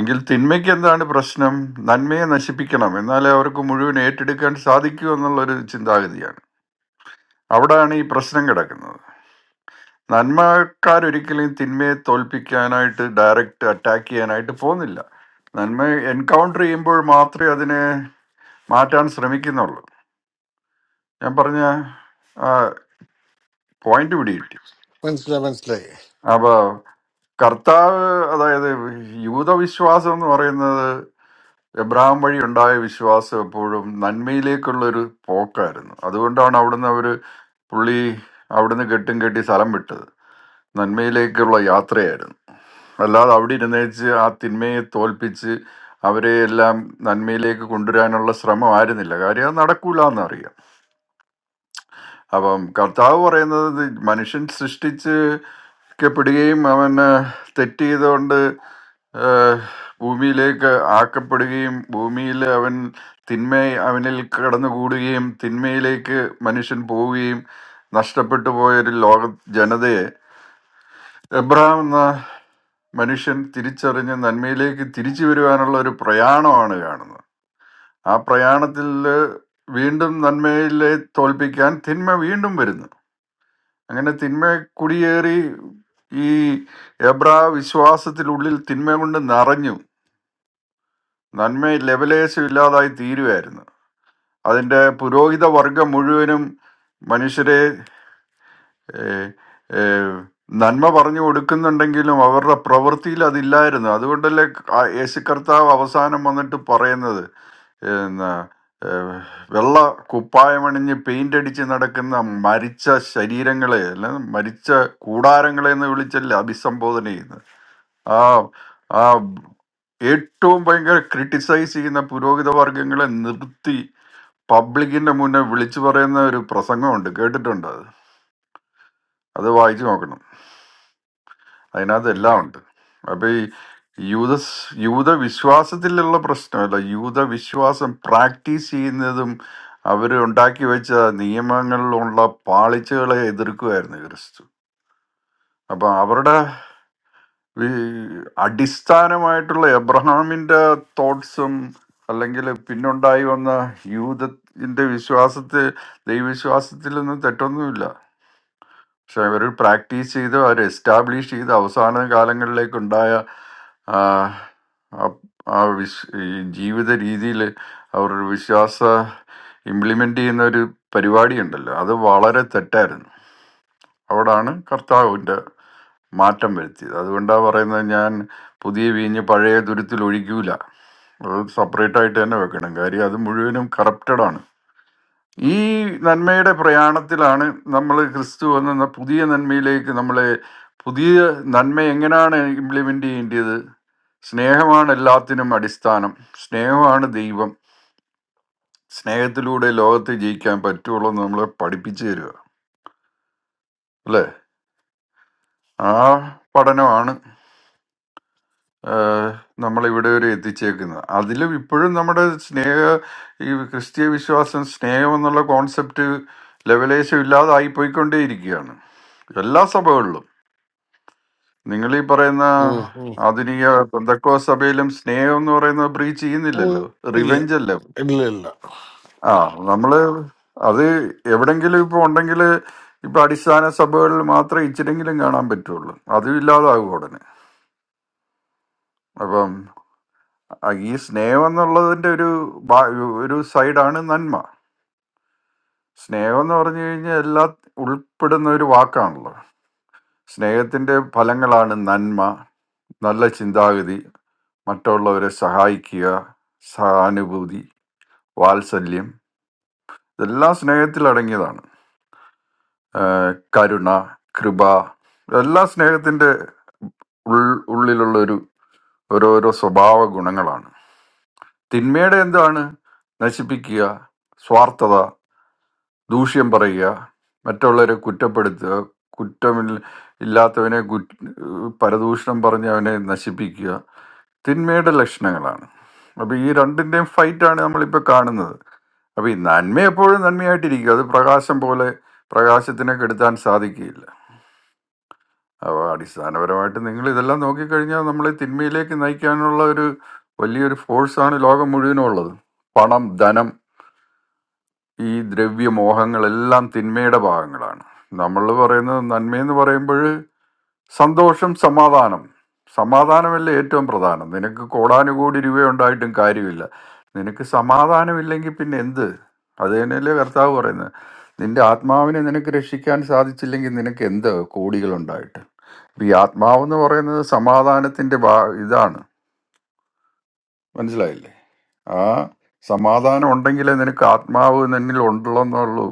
Speaker 14: എങ്കിൽ തിന്മയ്ക്ക് എന്താണ് പ്രശ്നം നന്മയെ നശിപ്പിക്കണം എന്നാലേ അവർക്ക് മുഴുവൻ ഏറ്റെടുക്കാൻ സാധിക്കൂ എന്നുള്ളൊരു ചിന്താഗതിയാണ് അവിടെയാണ് ഈ പ്രശ്നം കിടക്കുന്നത് നന്മക്കാരൊരിക്കലും തിന്മയെ തോൽപ്പിക്കാനായിട്ട് ഡയറക്റ്റ് അറ്റാക്ക് ചെയ്യാനായിട്ട് പോകുന്നില്ല നന്മ എൻകൗണ്ടർ ചെയ്യുമ്പോൾ മാത്രമേ അതിനെ മാറ്റാൻ ശ്രമിക്കുന്നുള്ളൂ ഞാൻ പറഞ്ഞ ആ പോയിന്റ് പിടികിട്ടി
Speaker 11: മനസ്സിലായി മനസ്സിലായി
Speaker 14: അപ്പോൾ കർത്താവ് അതായത് യൂതവിശ്വാസം എന്ന് പറയുന്നത് എബ്രഹാം വഴി ഉണ്ടായ വിശ്വാസം എപ്പോഴും നന്മയിലേക്കുള്ളൊരു പോക്കായിരുന്നു അതുകൊണ്ടാണ് അവിടുന്ന് അവർ പുള്ളി അവിടുന്ന് കെട്ടും കെട്ടി സ്ഥലം വിട്ടത് നന്മയിലേക്കുള്ള യാത്രയായിരുന്നു അല്ലാതെ അവിടെ ഇരുന്നേച്ച് ആ തിന്മയെ തോൽപ്പിച്ച് അവരെ എല്ലാം നന്മയിലേക്ക് കൊണ്ടുവരാനുള്ള ശ്രമം ആയിരുന്നില്ല കാര്യം അത് നടക്കൂല എന്നറിയാം അപ്പം കർത്താവ് പറയുന്നത് ഇത് മനുഷ്യൻ സൃഷ്ടിച്ച് ക്കപ്പെടുകയും അവന് തെറ്റ് ചെയ്തുകൊണ്ട് ഏഹ്, ഭൂമിയിലേക്ക് ആക്കപ്പെടുകയും ഭൂമിയിൽ അവൻ തിന്മ അവനിൽ കടന്നുകൂടുകയും തിന്മയിലേക്ക് മനുഷ്യൻ പോവുകയും നഷ്ടപ്പെട്ടു പോയൊരു ലോക ജനതയെ എബ്രഹാം എന്ന മനുഷ്യൻ തിരിച്ചറിഞ്ഞ് നന്മയിലേക്ക് തിരിച്ചു വരുവാനുള്ള ഒരു പ്രയാണമാണ് കാണുന്നത് ആ പ്രയാണത്തിൽ വീണ്ടും നന്മയിലെ തോൽപ്പിക്കാൻ തിന്മ വീണ്ടും വരുന്നു അങ്ങനെ തിന്മ കുടിയേറി ഈ എബ്രാ വിശ്വാസത്തിനുള്ളിൽ തിന്മ കൊണ്ട് നിറഞ്ഞു നന്മ ലെവലേശം ഇല്ലാതായി തീരുമായിരുന്നു അതിൻ്റെ പുരോഹിത വർഗം മുഴുവനും മനുഷ്യരെ ഏഹ്, ഏഹ്, നന്മ പറഞ്ഞു കൊടുക്കുന്നുണ്ടെങ്കിലും അവരുടെ പ്രവൃത്തിയിൽ അതില്ലായിരുന്നു അതുകൊണ്ടല്ലേ ആ യേശു കർത്താവ് അവസാനം വന്നിട്ട് പറയുന്നത് എന്നാ, ഏഹ്, വെള്ള കുപ്പായമണിഞ്ഞ് പെയിന്റ് അടിച്ച് നടക്കുന്ന മരിച്ച ശരീരങ്ങളെ അല്ല മരിച്ച കൂടാരങ്ങളെ എന്ന് വിളിച്ചല്ലേ അഭിസംബോധന ചെയ്യുന്നത് ആ ആ ഏറ്റവും ഭയങ്കര ക്രിട്ടിസൈസ് ചെയ്യുന്ന പുരോഹിത വർഗങ്ങളെ നിർത്തി പബ്ലിക്കിന്റെ മുന്നേ വിളിച്ചു പറയുന്ന ഒരു പ്രസംഗമുണ്ട് കേട്ടിട്ടുണ്ട് അത് അത് വായിച്ചു നോക്കണം അതിനകത്ത്
Speaker 11: ഉം.
Speaker 14: എല്ലാം ഉണ്ട് അപ്പൊ ഈ യൂത യൂത വിശ്വാസത്തിലുള്ള പ്രശ്നമല്ല യൂത വിശ്വാസം പ്രാക്ടീസ് ചെയ്യുന്നതും അവർ ഉണ്ടാക്കി വെച്ച നിയമങ്ങളിലുള്ള പാളിച്ചകളെ എതിർക്കുമായിരുന്നു ക്രിസ്തു അപ്പൊ അവരുടെ വി- അടിസ്ഥാനമായിട്ടുള്ള എബ്രഹാമിന്റെ തോട്ട്സും അല്ലെങ്കിൽ പിന്നുണ്ടായി വന്ന യൂതത്തിന്റെ വിശ്വാസത്തിൽ ദൈവവിശ്വാസത്തിലൊന്നും തെറ്റൊന്നുമില്ല പക്ഷെ അവർ പ്രാക്ടീസ് ചെയ്ത് അവർ എസ്റ്റാബ്ലിഷ് ചെയ്ത് അവസാന കാലങ്ങളിലേക്കുണ്ടായ ആ ആ- ആ വിശ് ഈ ജീവിത രീതിയിൽ അവരുടെ വിശ്വാസ ഇംപ്ലിമെൻ്റ് ചെയ്യുന്ന ഒരു പരിപാടിയുണ്ടല്ലോ അത് വളരെ തെറ്റായിരുന്നു അവിടാണ് കർത്താവിൻ്റെ മാറ്റം വരുത്തിയത് അതുകൊണ്ടാണ് പറയുന്നത് ഞാൻ പുതിയ വീഞ്ഞ് പഴയ തുരുത്തിൽ ഒഴിക്കൂല അത് സെപ്പറേറ്റ് ആയിട്ട് തന്നെ വെക്കണം കാര്യം അത് മുഴുവനും കറപ്റ്റഡാണ് ഈ നന്മയുടെ പ്രയാണത്തിലാണ് നമ്മൾ ക്രിസ്തു എന്ന പുതിയ നന്മയിലേക്ക് നമ്മളെ പുതിയ നന്മ എങ്ങനെയാണ് ഇംപ്ലിമെൻ്റ് ചെയ്യേണ്ടത് സ്നേഹമാണ് എല്ലാത്തിനും അടിസ്ഥാനം സ്നേഹമാണ് ദൈവം സ്നേഹത്തിലൂടെ ലോകത്തെ ജയിക്കാൻ പറ്റുള്ളൂ എന്ന് നമ്മളെ പഠിപ്പിച്ചു തരിക അല്ലേ ആ പഠനമാണ് ആഹ്, നമ്മളിവിടെ വരെ എത്തിച്ചേക്കുന്നത് അതിലും ഇപ്പോഴും നമ്മുടെ സ്നേഹ ഈ ക്രിസ്തീയ വിശ്വാസം സ്നേഹം എന്നുള്ള കോൺസെപ്റ്റ് ലെവലേശം ഇല്ലാതായി പോയിക്കൊണ്ടേയിരിക്കുകയാണ് എല്ലാ സഭകളിലും നിങ്ങൾ ഈ പറയുന്ന
Speaker 11: ഉം, ഉം.
Speaker 14: ആധുനിക പെന്തക്കോ സഭയിലും സ്നേഹം എന്ന് പറയുന്നത് ബ്രീച്ച്
Speaker 11: ഓ,
Speaker 14: ചെയ്യുന്നില്ലല്ലോ
Speaker 11: ഇല്ല
Speaker 14: റിവെഞ്ച് അല്ലേ
Speaker 11: ഇല്ല ഇല്ല
Speaker 14: ആ നമ്മള് അത് എവിടെങ്കിലും ഇപ്പൊ ഉണ്ടെങ്കിൽ ഇപ്പൊ അടിസ്ഥാന സഭകളിൽ മാത്രമേ ഇച്ചിരെങ്കിലും കാണാൻ പറ്റുള്ളൂ അതും ഇല്ലാതാകും ഉടനെ അപ്പം ആ ഈ സ്നേഹം എന്നുള്ളതിന്റെ ഒരു ഭാ- ഒരു സൈഡാണ് നന്മ സ്നേഹം എന്ന് പറഞ്ഞു കഴിഞ്ഞാൽ എല്ലാ ഉൾപ്പെടുന്ന ഒരു വാക്കാണല്ലോ സ്നേഹത്തിന്റെ ഫലങ്ങളാണ് നന്മ നല്ല ചിന്താഗതി മറ്റുള്ളവരെ സഹായിക്കുക സഹാനുഭൂതി വാത്സല്യം ഇതെല്ലാം സ്നേഹത്തിൽ അടങ്ങിയതാണ് ആഹ് കരുണ കൃപ ഇതെല്ലാം സ്നേഹത്തിന്റെ ഉൾ- ഉള്ളിലുള്ള ഒരു ഓരോരോ സ്വഭാവ ഗുണങ്ങളാണ് തിന്മയുടെ എന്താണ് നശിപ്പിക്കുക സ്വാർത്ഥത ദൂഷ്യം പറയുക മറ്റുള്ളവരെ കുറ്റപ്പെടുത്തുക കുറ്റമില്ല ഇല്ലാത്തവനെ കുറ്റ പരദൂഷണം പറഞ്ഞ് അവനെ നശിപ്പിക്കുക തിന്മയുടെ ലക്ഷണങ്ങളാണ് അപ്പോൾ ഈ രണ്ടിൻ്റെയും ഫൈറ്റാണ് നമ്മളിപ്പോൾ കാണുന്നത് അപ്പൊ ഈ നന്മ എപ്പോഴും നന്മയായിട്ടിരിക്കും അത് പ്രകാശം പോലെ പ്രകാശത്തിനെ കെടുത്താൻ സാധിക്കുകയില്ല അപ്പോൾ അടിസ്ഥാനപരമായിട്ട് നിങ്ങൾ ഇതെല്ലാം നോക്കിക്കഴിഞ്ഞാൽ നമ്മളെ തിന്മയിലേക്ക് നയിക്കാനുള്ള ഒരു വലിയൊരു ഫോഴ്സാണ് ലോകം മുഴുവനും ഉള്ളത് പണം ധനം ഈ ദ്രവ്യമോഹങ്ങളെല്ലാം തിന്മയുടെ ഭാഗങ്ങളാണ് നമ്മൾ പറയുന്നത് നന്മയെന്ന് പറയുമ്പോൾ സന്തോഷം സമാധാനം സമാധാനമല്ലേ ഏറ്റവും പ്രധാനം നിനക്ക് കോടാനുകോടി രൂപയുണ്ടായിട്ടും കാര്യമില്ല നിനക്ക് സമാധാനമില്ലെങ്കിൽ പിന്നെ എന്ത് അത് തന്നെയല്ലേ കർത്താവ് പറയുന്നത് നിന്റെ ആത്മാവിനെ നിനക്ക് രക്ഷിക്കാൻ സാധിച്ചില്ലെങ്കിൽ നിനക്ക് എന്ത് കോടികളുണ്ടായിട്ട് ഇപ്പം ഈ ആത്മാവെന്ന് പറയുന്നത് സമാധാനത്തിൻ്റെ ഭാ ഇതാണ് മനസ്സിലായില്ലേ ആ സമാധാനം ഉണ്ടെങ്കിലേ നിനക്ക് ആത്മാവ് നിന്നിൽ ഉണ്ടെന്നുള്ളൂ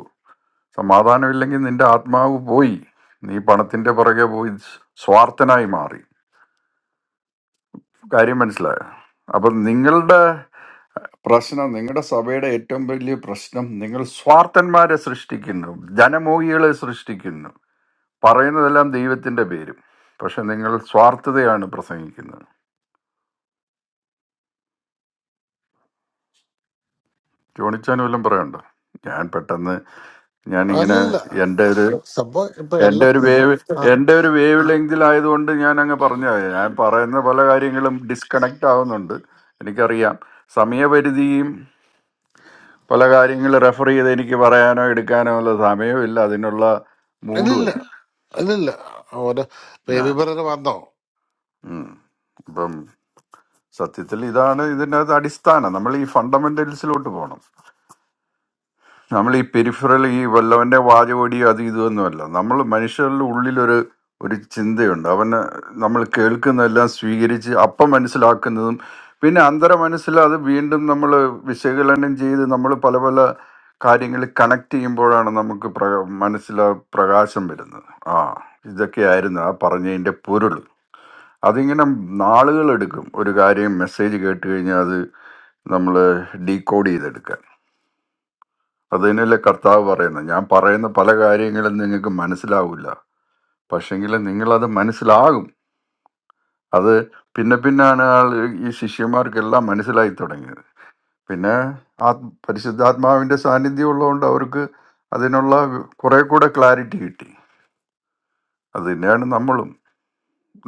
Speaker 14: സമാധാനമില്ലെങ്കിൽ നിന്റെ ആത്മാവ് പോയി നീ പണത്തിൻ്റെ പുറകെ പോയി സ്വാർത്ഥനായി മാറി കാര്യം മനസ്സിലായോ അപ്പം നിങ്ങളുടെ പ്രശ്നം നിങ്ങളുടെ സഭയുടെ ഏറ്റവും വലിയ പ്രശ്നം നിങ്ങൾ സ്വാർത്ഥന്മാരെ സൃഷ്ടിക്കുന്നു ജനമോഹികളെ സൃഷ്ടിക്കുന്നു പറയുന്നതെല്ലാം ദൈവത്തിൻ്റെ പേരും പക്ഷെ നിങ്ങൾ സ്വാർത്ഥതയാണ് പ്രസംഗിക്കുന്നത് ജോണിച്ചാൻ വല്ലതും പറയണ്ടോ ഞാൻ പെട്ടെന്ന് ഞാനിങ്ങനെ
Speaker 11: അല്ലല്ല
Speaker 14: എൻ്റെ ഒരു
Speaker 11: സംഭവം ഇപ്പൊ
Speaker 14: എന്റെ
Speaker 11: എല്ലാ
Speaker 14: ഒരു വേവ്
Speaker 11: ആ
Speaker 14: എന്റെ ഒരു വേവ് ലെങ്തിലായതുകൊണ്ട് ഞാൻ അങ്ങ് പറഞ്ഞു ഞാൻ പറയുന്ന പല കാര്യങ്ങളും ഡിസ്കണക്ട് ആവുന്നുണ്ട് എനിക്കറിയാം സമയപരിധിയും പല കാര്യങ്ങൾ റെഫർ ചെയ്ത് എനിക്ക് പറയാനോ എടുക്കാനോ ഉള്ള സമയമില്ല അതിനുള്ള
Speaker 11: ഇല്ലില്ല
Speaker 14: മൂടുമല്ല
Speaker 11: ഇല്ലില്ല ഓരോ ബേബി
Speaker 14: ഞാൻ
Speaker 11: ബ്രദർ വന്നോ
Speaker 14: ഉം. അപ്പം സത്യത്തിൽ ഇതാണ് ഇതിൻ്റെ അടിസ്ഥാനം നമ്മൾ ഈ ഫണ്ടമെന്റൽസിലോട്ട് പോകണം നമ്മൾ ഈ പെരിഫറൽ ഈ വല്ലവന്റെ വാചകോടി അത് ഇതൊന്നുമല്ല നമ്മൾ മനുഷ്യരുടെ ഉള്ളിലൊരു ഒരു ചിന്തയുണ്ട് അവന് നമ്മൾ കേൾക്കുന്നതെല്ലാം സ്വീകരിച്ച് അപ്പം മനസ്സിലാക്കുന്നതും പിന്നെ അന്തര മനസ്സിൽ അത് വീണ്ടും നമ്മൾ വിശകലനം ചെയ്ത് നമ്മൾ പല പല കാര്യങ്ങൾ കണക്ട് ചെയ്യുമ്പോഴാണ് നമുക്ക് പ്ര മനസ്സിൽ ആ പ്രകാശം വരുന്നത് ആ ഇതൊക്കെയായിരുന്നു ആ പറഞ്ഞതിൻ്റെ പൊരുൾ അതിങ്ങനെ നാളുകളെടുക്കും ഒരു കാര്യം മെസ്സേജ് കേട്ട് കഴിഞ്ഞാൽ അത് നമ്മൾ ഡീകോഡ് ചെയ്തെടുക്കുക അതിനല്ലേ കർത്താവ് പറയുന്നത് ഞാൻ പറയുന്ന പല കാര്യങ്ങളും നിങ്ങൾക്ക് മനസ്സിലാവില്ല പക്ഷെങ്കിൽ നിങ്ങളത് മനസ്സിലാകും അത് പിന്നെ പിന്നാണ് ആൾ ഈ ശിഷ്യന്മാർക്കെല്ലാം മനസ്സിലായി തുടങ്ങിയത് പിന്നെ ആ പരിശുദ്ധാത്മാവിൻ്റെ സാന്നിധ്യം ഉള്ളതുകൊണ്ട് അവർക്ക് അതിനുള്ള കുറെ കൂടെ ക്ലാരിറ്റി കിട്ടി അത് തന്നെയാണ് നമ്മളും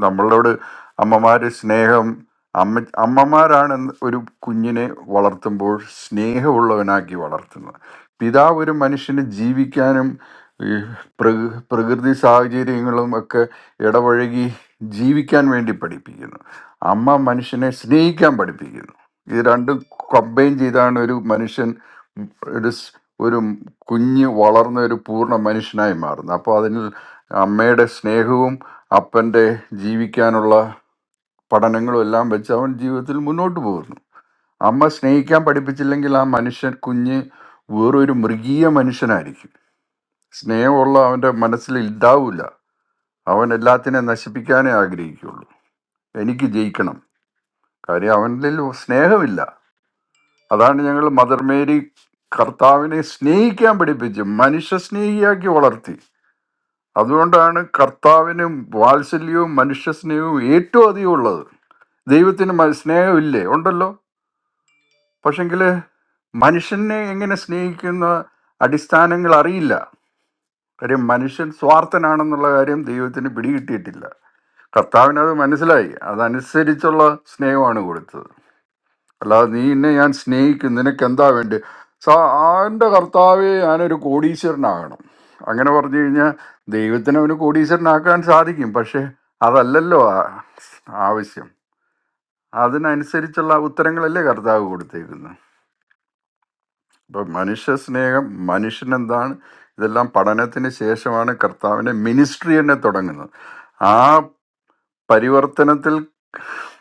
Speaker 14: നമ്മളോട് അമ്മമാർ സ്നേഹം അമ്മ അമ്മമാരാണ് എന്ന് ഒരു കുഞ്ഞിനെ വളർത്തുമ്പോൾ സ്നേഹമുള്ളവനാക്കി വളർത്തുന്നത് പിതാവ് ഒരു മനുഷ്യന് ജീവിക്കാനും ഈ പ്രകൃ പ്രകൃതി സാഹചര്യങ്ങളും ഒക്കെ ഇടപഴകി ജീവിക്കാൻ വേണ്ടി പഠിപ്പിക്കുന്നു അമ്മ മനുഷ്യനെ സ്നേഹിക്കാൻ പഠിപ്പിക്കുന്നു ഇത് രണ്ടും കമ്പൈൻ ചെയ്താണ് ഒരു മനുഷ്യൻ ഒരു സ്- ഒരു കുഞ്ഞ് വളർന്ന ഒരു പൂർണ്ണ മനുഷ്യനായി മാറുന്നത് അപ്പോൾ അതിൽ അമ്മയുടെ സ്നേഹവും അപ്പൻ്റെ ജീവിക്കാനുള്ള പഠനങ്ങളും എല്ലാം വെച്ച് അവൻ ജീവിതത്തിൽ മുന്നോട്ട് പോകുന്നു അമ്മ സ്നേഹിക്കാൻ പഠിപ്പിച്ചില്ലെങ്കിൽ ആ മനുഷ്യൻ കുഞ്ഞ് വേറൊരു മൃഗീയ മനുഷ്യനായിരിക്കും സ്നേഹമുള്ള അവൻ്റെ മനസ്സിൽ ഉണ്ടാവില്ല അവൻ എല്ലാത്തിനെ നശിപ്പിക്കാനേ ആഗ്രഹിക്കുള്ളൂ എനിക്ക് ജയിക്കണം കാര്യം അവനിൽ സ്നേഹമില്ല അതാണ് ഞങ്ങൾ മദർ മേരി കർത്താവിനെ സ്നേഹിക്കാൻ പഠിപ്പിച്ച് മനുഷ്യ സ്നേഹിയാക്കി വളർത്തി അതുകൊണ്ടാണ് കർത്താവിനും വാത്സല്യവും മനുഷ്യസ്നേഹവും ഏറ്റവും അധികം ഉള്ളത് ദൈവത്തിന് മ- സ്നേഹമില്ലേ ഉണ്ടല്ലോ പക്ഷെങ്കിൽ മനുഷ്യനെ എങ്ങനെ സ്നേഹിക്കുന്ന അടിസ്ഥാനങ്ങൾ അറിയില്ല കാര്യം മനുഷ്യൻ സ്വാർത്ഥനാണെന്നുള്ള കാര്യം ദൈവത്തിന് പിടികിട്ടിയിട്ടില്ല കർത്താവിനത് മനസ്സിലായി അതനുസരിച്ചുള്ള സ്നേഹമാണ് കൊടുത്തത് അല്ലാതെ നീ എന്നെ ഞാൻ സ്നേഹിക്കും നിനക്ക് എന്താ വേണ്ടി സാ എൻ്റെ കർത്താവെ ഞാനൊരു കോടീശ്വരനാകണം അങ്ങനെ പറഞ്ഞു കഴിഞ്ഞാൽ ദൈവത്തിന് അവന് കോടീശ്വരനാക്കാൻ സാധിക്കും പക്ഷേ അതല്ലല്ലോ ആ- ആവശ്യം അതിനനുസരിച്ചുള്ള ഉത്തരങ്ങളല്ലേ കർത്താവ് കൊടുത്തേക്കുന്നത് ഇപ്പം മനുഷ്യ സ്നേഹം മനുഷ്യനെന്താണ് ഇതെല്ലാം പഠനത്തിന് ശേഷമാണ് കർത്താവിൻ്റെ മിനിസ്ട്രി തന്നെ തുടങ്ങുന്നത് ആ പരിവർത്തനത്തിൽ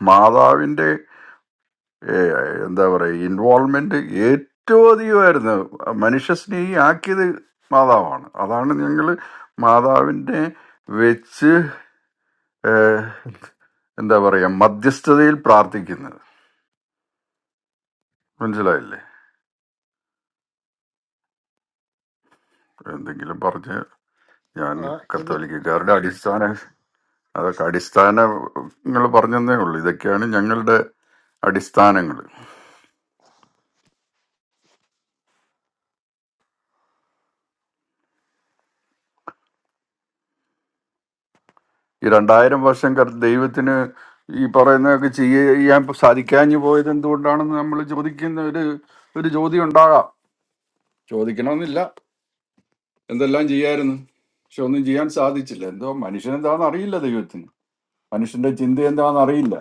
Speaker 14: മാതാവിൻ്റെ ഏ, എന്താ പറയുക ഇൻവോൾവ്മെന്റ് ഏറ്റവും അധികമായിരുന്നു മനുഷ്യ സ്നേഹി ആക്കിയത് മാതാവാണ് അതാണ് ഞങ്ങൾ മാതാവിനെ വെച്ച് ഏ, എന്താ പറയുക മധ്യസ്ഥതയിൽ പ്രാർത്ഥിക്കുന്നത് മനസ്സിലായില്ലേ എന്തെങ്കിലും പറഞ്ഞ് ഞാൻ
Speaker 11: ആ, ഇത്
Speaker 14: കത്തോലിക്കക്കാരുടെ അടിസ്ഥാന അതൊക്കെ അടിസ്ഥാനങ്ങൾ പറഞ്ഞതേ ഉള്ളൂ ഇതൊക്കെയാണ് ഞങ്ങളുടെ അടിസ്ഥാനങ്ങൾ ഈ രണ്ടായിരം വർഷം കർ ദൈവത്തിന് ഈ പറയുന്നതൊക്കെ ചെയ്യാൻ സാധിക്കാഞ്ഞു പോയത് എന്തുകൊണ്ടാണെന്ന് നമ്മൾ ചോദിക്കുന്ന ഒരു ഒരു ചോദ്യം ഉണ്ടാകാം ചോദിക്കണമെന്നില്ല എന്തെല്ലാം ചെയ്യായിരുന്നു പക്ഷെ ഒന്നും ചെയ്യാൻ സാധിച്ചില്ല എന്തോ മനുഷ്യൻ എന്താണെന്ന് അറിയില്ല ദൈവത്തിന് മനുഷ്യന്റെ ചിന്ത എന്താണെന്ന് അറിയില്ല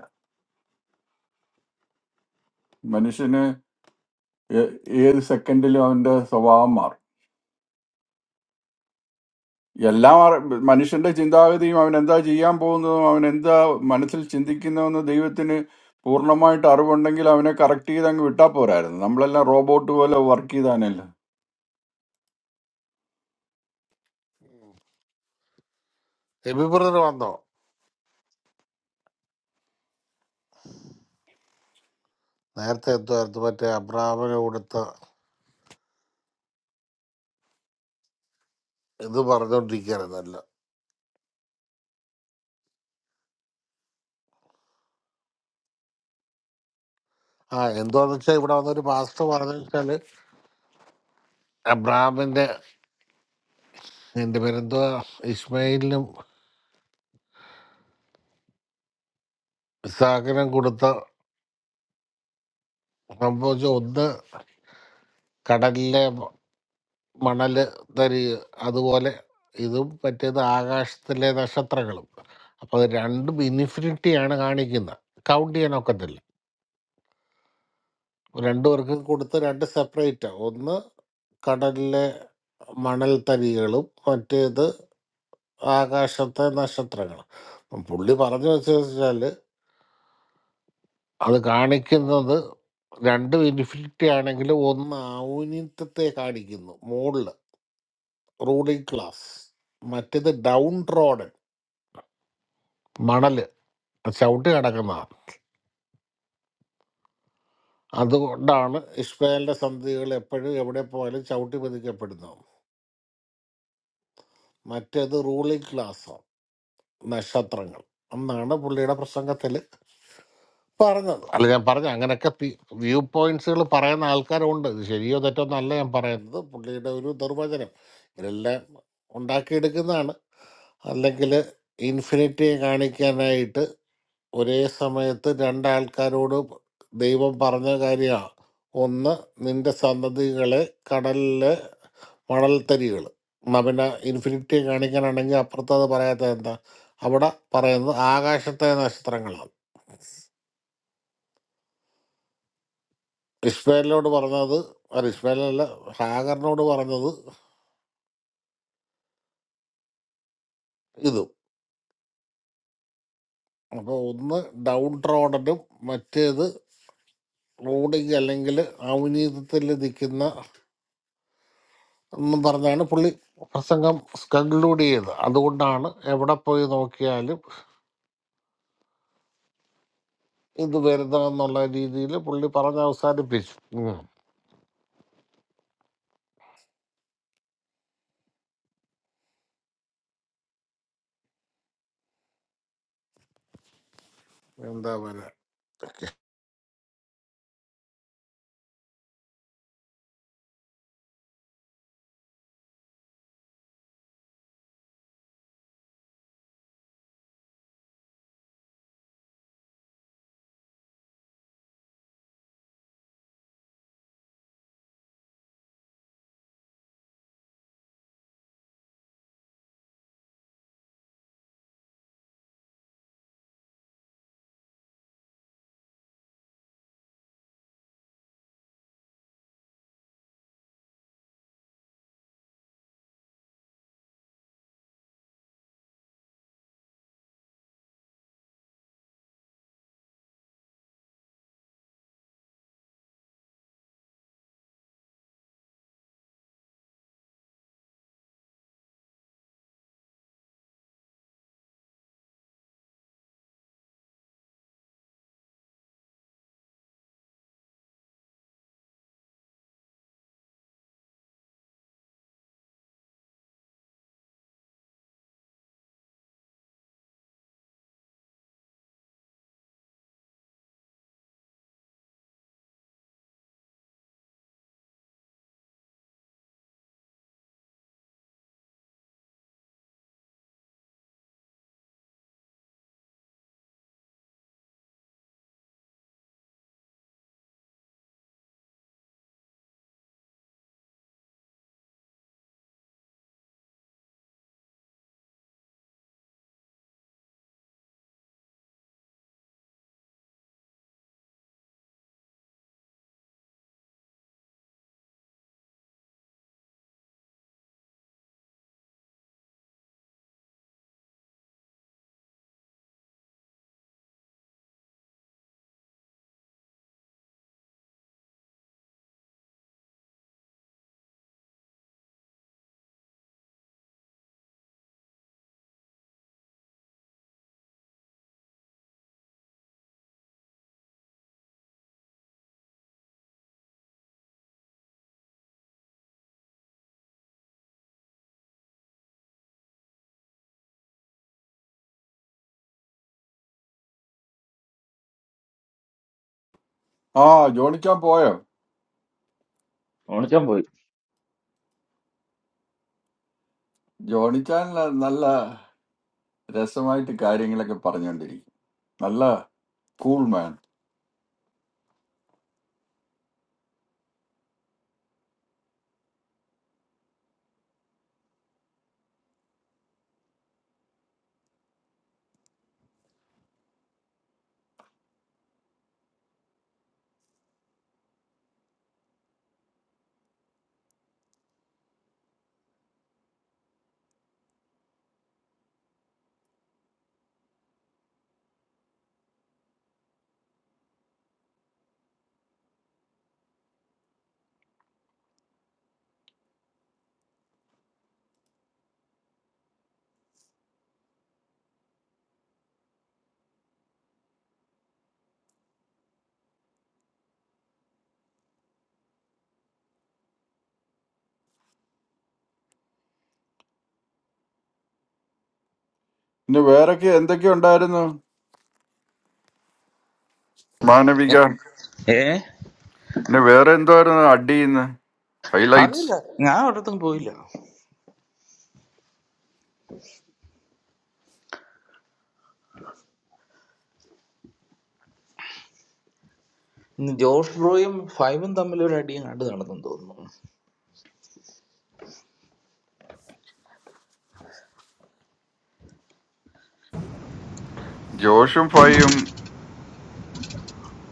Speaker 14: മനുഷ്യന് ഏ- ഏത് സെക്കൻഡിലും അവന്റെ സ്വഭാവം മാറും എല്ലാം അറി- മനുഷ്യന്റെ ചിന്താഗതിയും അവൻ എന്താ ചെയ്യാൻ പോകുന്നതും അവൻ എന്താ മനസ്സിൽ ചിന്തിക്കുന്നതെന്ന് ദൈവത്തിന് പൂർണ്ണമായിട്ട് അറിവുണ്ടെങ്കിൽ അവനെ കറക്റ്റ് ചെയ്ത് അങ്ങ് വിട്ടാ പോരായിരുന്നു നമ്മളെല്ലാം റോബോട്ട് പോലെ വർക്ക് ചെയ്താനല്ല
Speaker 11: ബേബി ബ്രദർ വന്നോ നേരത്തെ എന്തുവായിരുന്നു മറ്റേ അബ്രാഹ്മിനെ കൊടുത്ത ഇത് പറഞ്ഞോണ്ടിരിക്കുകയായിരുന്നല്ലോ ആ എന്തുവാന്ന് വെച്ചാൽ ഇവിടെ വന്നൊരു പാസ്റ്റർ പറഞ്ഞു വെച്ചാല് അബ്രാഹ്മിന്റെ എന്റെ പേരെന്തുവാ ഇസ്മയിലിനും ഇസാഖിനും കൊടുത്ത സംഭവിച്ച ഒന്ന് കടലിലെ മണല് തരി അതുപോലെ ഇതും മറ്റേത് ആകാശത്തിലെ നക്ഷത്രങ്ങളും അപ്പൊ അത് രണ്ടും ഇൻഫിനിറ്റിയാണ് കാണിക്കുന്നത് കൗണ്ട് ചെയ്യാൻ ഒക്കത്തില്ല രണ്ടു പേർക്കും കൊടുത്ത് രണ്ട് സെപ്പറേറ്റാ ഒന്ന് കടലിലെ മണൽത്തരികളും മറ്റേത് ആകാശത്തെ നക്ഷത്രങ്ങളും പുള്ളി പറഞ്ഞു വെച്ച് വെച്ചാൽ അത് കാണിക്കുന്നത് രണ്ടും ഇൻഫിനിറ്റി ആണെങ്കിലും ഒന്ന് ഔന്നിത്യത്തെ കാണിക്കുന്നു മുകളിൽ റൂളിംഗ് ക്ലാസ് മറ്റേത് ഡൗൺ റോഡ് മണല് ചവിട്ടി കിടക്കുന്നതാണ് അതുകൊണ്ടാണ് ഇഷ്മയലിന്റെ സന്ധികൾ എപ്പോഴും എവിടെ പോയാലും ചവിട്ടി പതിക്കപ്പെടുന്നത് മറ്റേത് റൂളിംഗ് ക്ലാസ് നക്ഷത്രങ്ങൾ എന്നാണ് പുള്ളിയുടെ പ്രസംഗത്തിൽ പറഞ്ഞത് അല്ല ഞാൻ പറഞ്ഞ അങ്ങനെയൊക്കെ വ്യൂ പോയിന്റ്സുകൾ പറയുന്ന ആൾക്കാരുണ്ട് ഇത് ശരിയോ തെറ്റോ എന്നല്ല ഞാൻ പറയുന്നത് പുള്ളിയുടെ ഒരു നിർവചനം ഇതെല്ലാം ഉണ്ടാക്കിയെടുക്കുന്നതാണ് അല്ലെങ്കിൽ ഇൻഫിനിറ്റിയെ കാണിക്കാനായിട്ട് ഒരേ സമയത്ത് രണ്ടാൾക്കാരോട് ദൈവം പറഞ്ഞ കാര്യമാണ് ഒന്ന് നിന്റെ സന്തതികളെ കടലിൽ മണൽത്തരികൾ എന്നാൽ പിന്നെ ഇൻഫിനിറ്റിയെ കാണിക്കാനാണെങ്കിൽ അപ്പുറത്ത് അത് പറയാത്ത എന്താ അവിടെ പറയുന്നത് ആകാശത്തെ നക്ഷത്രങ്ങളാണ് ഇസ്മേലിനോട് പറഞ്ഞത് അല്ല ഇസ്മേലല്ല ഹാഗറിനോട് പറഞ്ഞത് ഇതും അപ്പോൾ ഒന്ന് ഡൗൺ റോഡനും മറ്റേത് റോഡിങ് അല്ലെങ്കിൽ അവിനീതത്തിൽ നിൽക്കുന്ന എന്നും പറഞ്ഞാണ് പുള്ളി പ്രസംഗം കൺക്ലൂഡ് ചെയ്തത് അതുകൊണ്ടാണ് എവിടെ പോയി നോക്കിയാലും ഇത് വരുന്നതെന്നുള്ള രീതിയിൽ പുള്ളി പറഞ്ഞ് അവസാനിപ്പിച്ചു ഉം. എന്താ പറയുക
Speaker 14: ആ ജോണിച്ചാൻ പോയോ
Speaker 29: ഓണിച്ചൻ പോയി
Speaker 14: ജോണിച്ചാൻ ന- നല്ല രസമായിട്ട് കാര്യങ്ങളൊക്കെ പറഞ്ഞുകൊണ്ടിരിക്കും നല്ല കൂൾ മാൻ പിന്നെ വേറൊക്കെ എന്തൊക്കെ ഉണ്ടായിരുന്നു മാനവിക
Speaker 29: ഏ
Speaker 14: പിന്നെ വേറെ എന്തോ ആയിരുന്നു അടിയുന്ന ഹൈലൈറ്റ്സ്
Speaker 29: അറിയില്ല ഞാൻ ഒരിടത്തും പോയില്ല ഇന്ന് ജോഷ് ബ്രോയും ഫൈവും തമ്മിൽ ഒരു അടിയും കണ്ടു നടന്നു തോന്നുന്നു
Speaker 14: ജോഷും ഫൈയും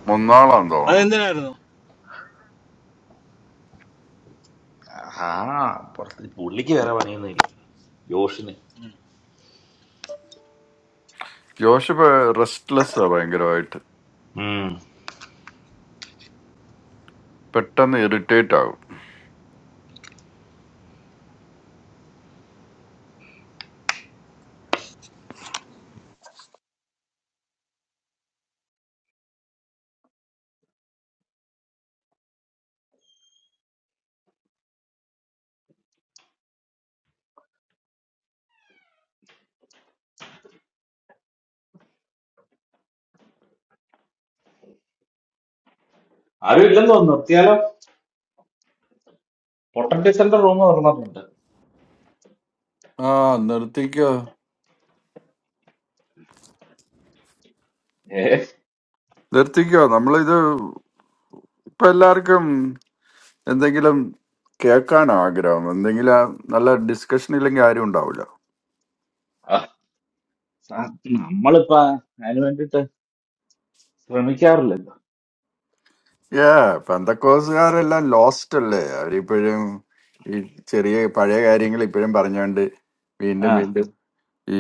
Speaker 14: മൂന്നാളാന്ന് തോന്നുന്നു
Speaker 28: അതെന്തിനായിരുന്നു
Speaker 29: ആ പുറത്ത് പുള്ളിക്ക് വേറെ പണിയൊന്നുമില്ല ജോഷിന്
Speaker 14: ജോഷപ്പ് റെസ്റ്റ്ലെസ് ആ ഭയങ്കരമായിട്ട്
Speaker 29: ഉം.
Speaker 14: പെട്ടെന്ന് ഇറിറ്റേറ്റ് ആകും
Speaker 29: ആരും ഇല്ലെന്ന് തോന്നുന്നു നിർത്തിയാലോ പൊട്ടൻറ്റി സെന്റർ റൂം തുറന്നിട്ടുണ്ട്
Speaker 14: ആ നിർത്തിക്കോ
Speaker 29: ഏ
Speaker 14: നിർത്തിക്കോ നമ്മളിത് ഇപ്പൊ എല്ലാവർക്കും എന്തെങ്കിലും കേൾക്കാൻ ആഗ്രഹം എന്തെങ്കിലും നല്ല ഡിസ്കഷൻ ഇല്ലെങ്കിൽ ആരും ഉണ്ടാവില്ല
Speaker 29: ആ, സ- നമ്മളിപ്പോ അതിന് വേണ്ടിട്ട് ശ്രമിക്കാറില്ലല്ലോ
Speaker 14: ഏ പെന്തക്കോസുകാരെല്ലാം ലോസ്റ്റ് അല്ലേ അവരിപ്പോഴും ഈ ചെറിയ പഴയ കാര്യങ്ങൾ ഇപ്പോഴും പറഞ്ഞുകൊണ്ട്
Speaker 29: ആ
Speaker 14: വീണ്ടും വീണ്ടും ഈ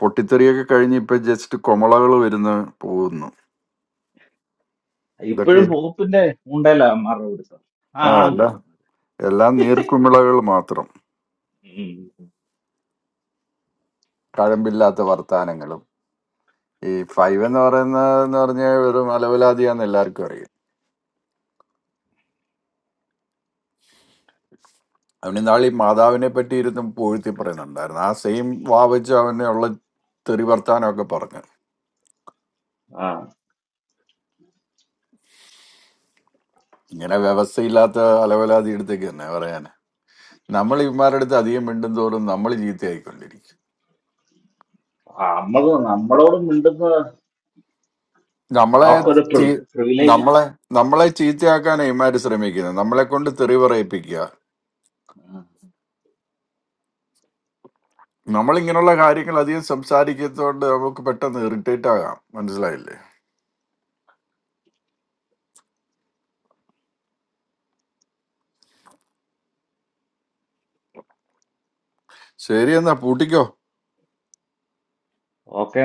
Speaker 14: പൊട്ടിത്തെറിയൊക്കെ കഴിഞ്ഞ് ഇപ്പൊ ജസ്റ്റ് കുമളകൾ വരുന്ന പോകുന്നു ഇതൊക്കെ
Speaker 29: ഇപ്പോഴും പോപ്പിന്റെ ഉണ്ടല്ലോ അമ്മാരുടെ പിടുത്തം ആ
Speaker 14: ആ
Speaker 29: ആണം
Speaker 14: അല്ല
Speaker 29: കിട്ടും
Speaker 14: എല്ലാം നീർക്കുമിളകൾ മാത്രം
Speaker 29: ഉം.
Speaker 14: കഴമ്പില്ലാത്ത വർത്താനങ്ങളും ഈ ഫൈവ് എന്ന് പറയുന്നത് എന്ന് പറഞ്ഞാൽ ഒരു മലവലാതിയാന്ന് എല്ലാവർക്കും അറിയാം അവന് നാളെ ഈ മാതാവിനെ പറ്റി ഇരുന്ന് പൂഴ്ത്തി പറയുന്നുണ്ടായിരുന്നു ആ സെയിം വാവച്ച് അവനെ ഉള്ള തെറി വർത്താനമൊക്കെ പറഞ്ഞു
Speaker 29: ആ
Speaker 14: ഇങ്ങനെ വ്യവസ്ഥയില്ലാത്ത അലവലാതി എടുത്തേക്ക് തന്നെ പറയാൻ നമ്മൾ ഇവന്മാരുടെ അടുത്ത് അധികം മിണ്ടും തോറും നമ്മൾ ചീത്തയായിക്കൊണ്ടിരിക്കും
Speaker 29: നമ്മള് നമ്മളോട് മിണ്ടുന്നത്
Speaker 14: നമ്മളെ
Speaker 29: അവർക്കൊരു
Speaker 14: ചീ-
Speaker 29: പ്രിവിലേജ് ആണ്
Speaker 14: നമ്മളെ നമ്മളെ ചീത്തയാക്കാനാണ് ഇവന്മാര് ശ്രമിക്കുന്നത് നമ്മളെ കൊണ്ട് തെറി പറയിപ്പിക്കുക നമ്മൾ ഇങ്ങനെയുള്ള കാര്യങ്ങൾ അധികം സംസാരിക്കുന്നതുകൊണ്ട് നമുക്ക് പെട്ടെന്ന് ഇറിറ്റേറ്റ് ആകാം മനസ്സിലായില്ലേ ശരി എന്നാ പൂട്ടിക്കോ
Speaker 29: ഓക്കെ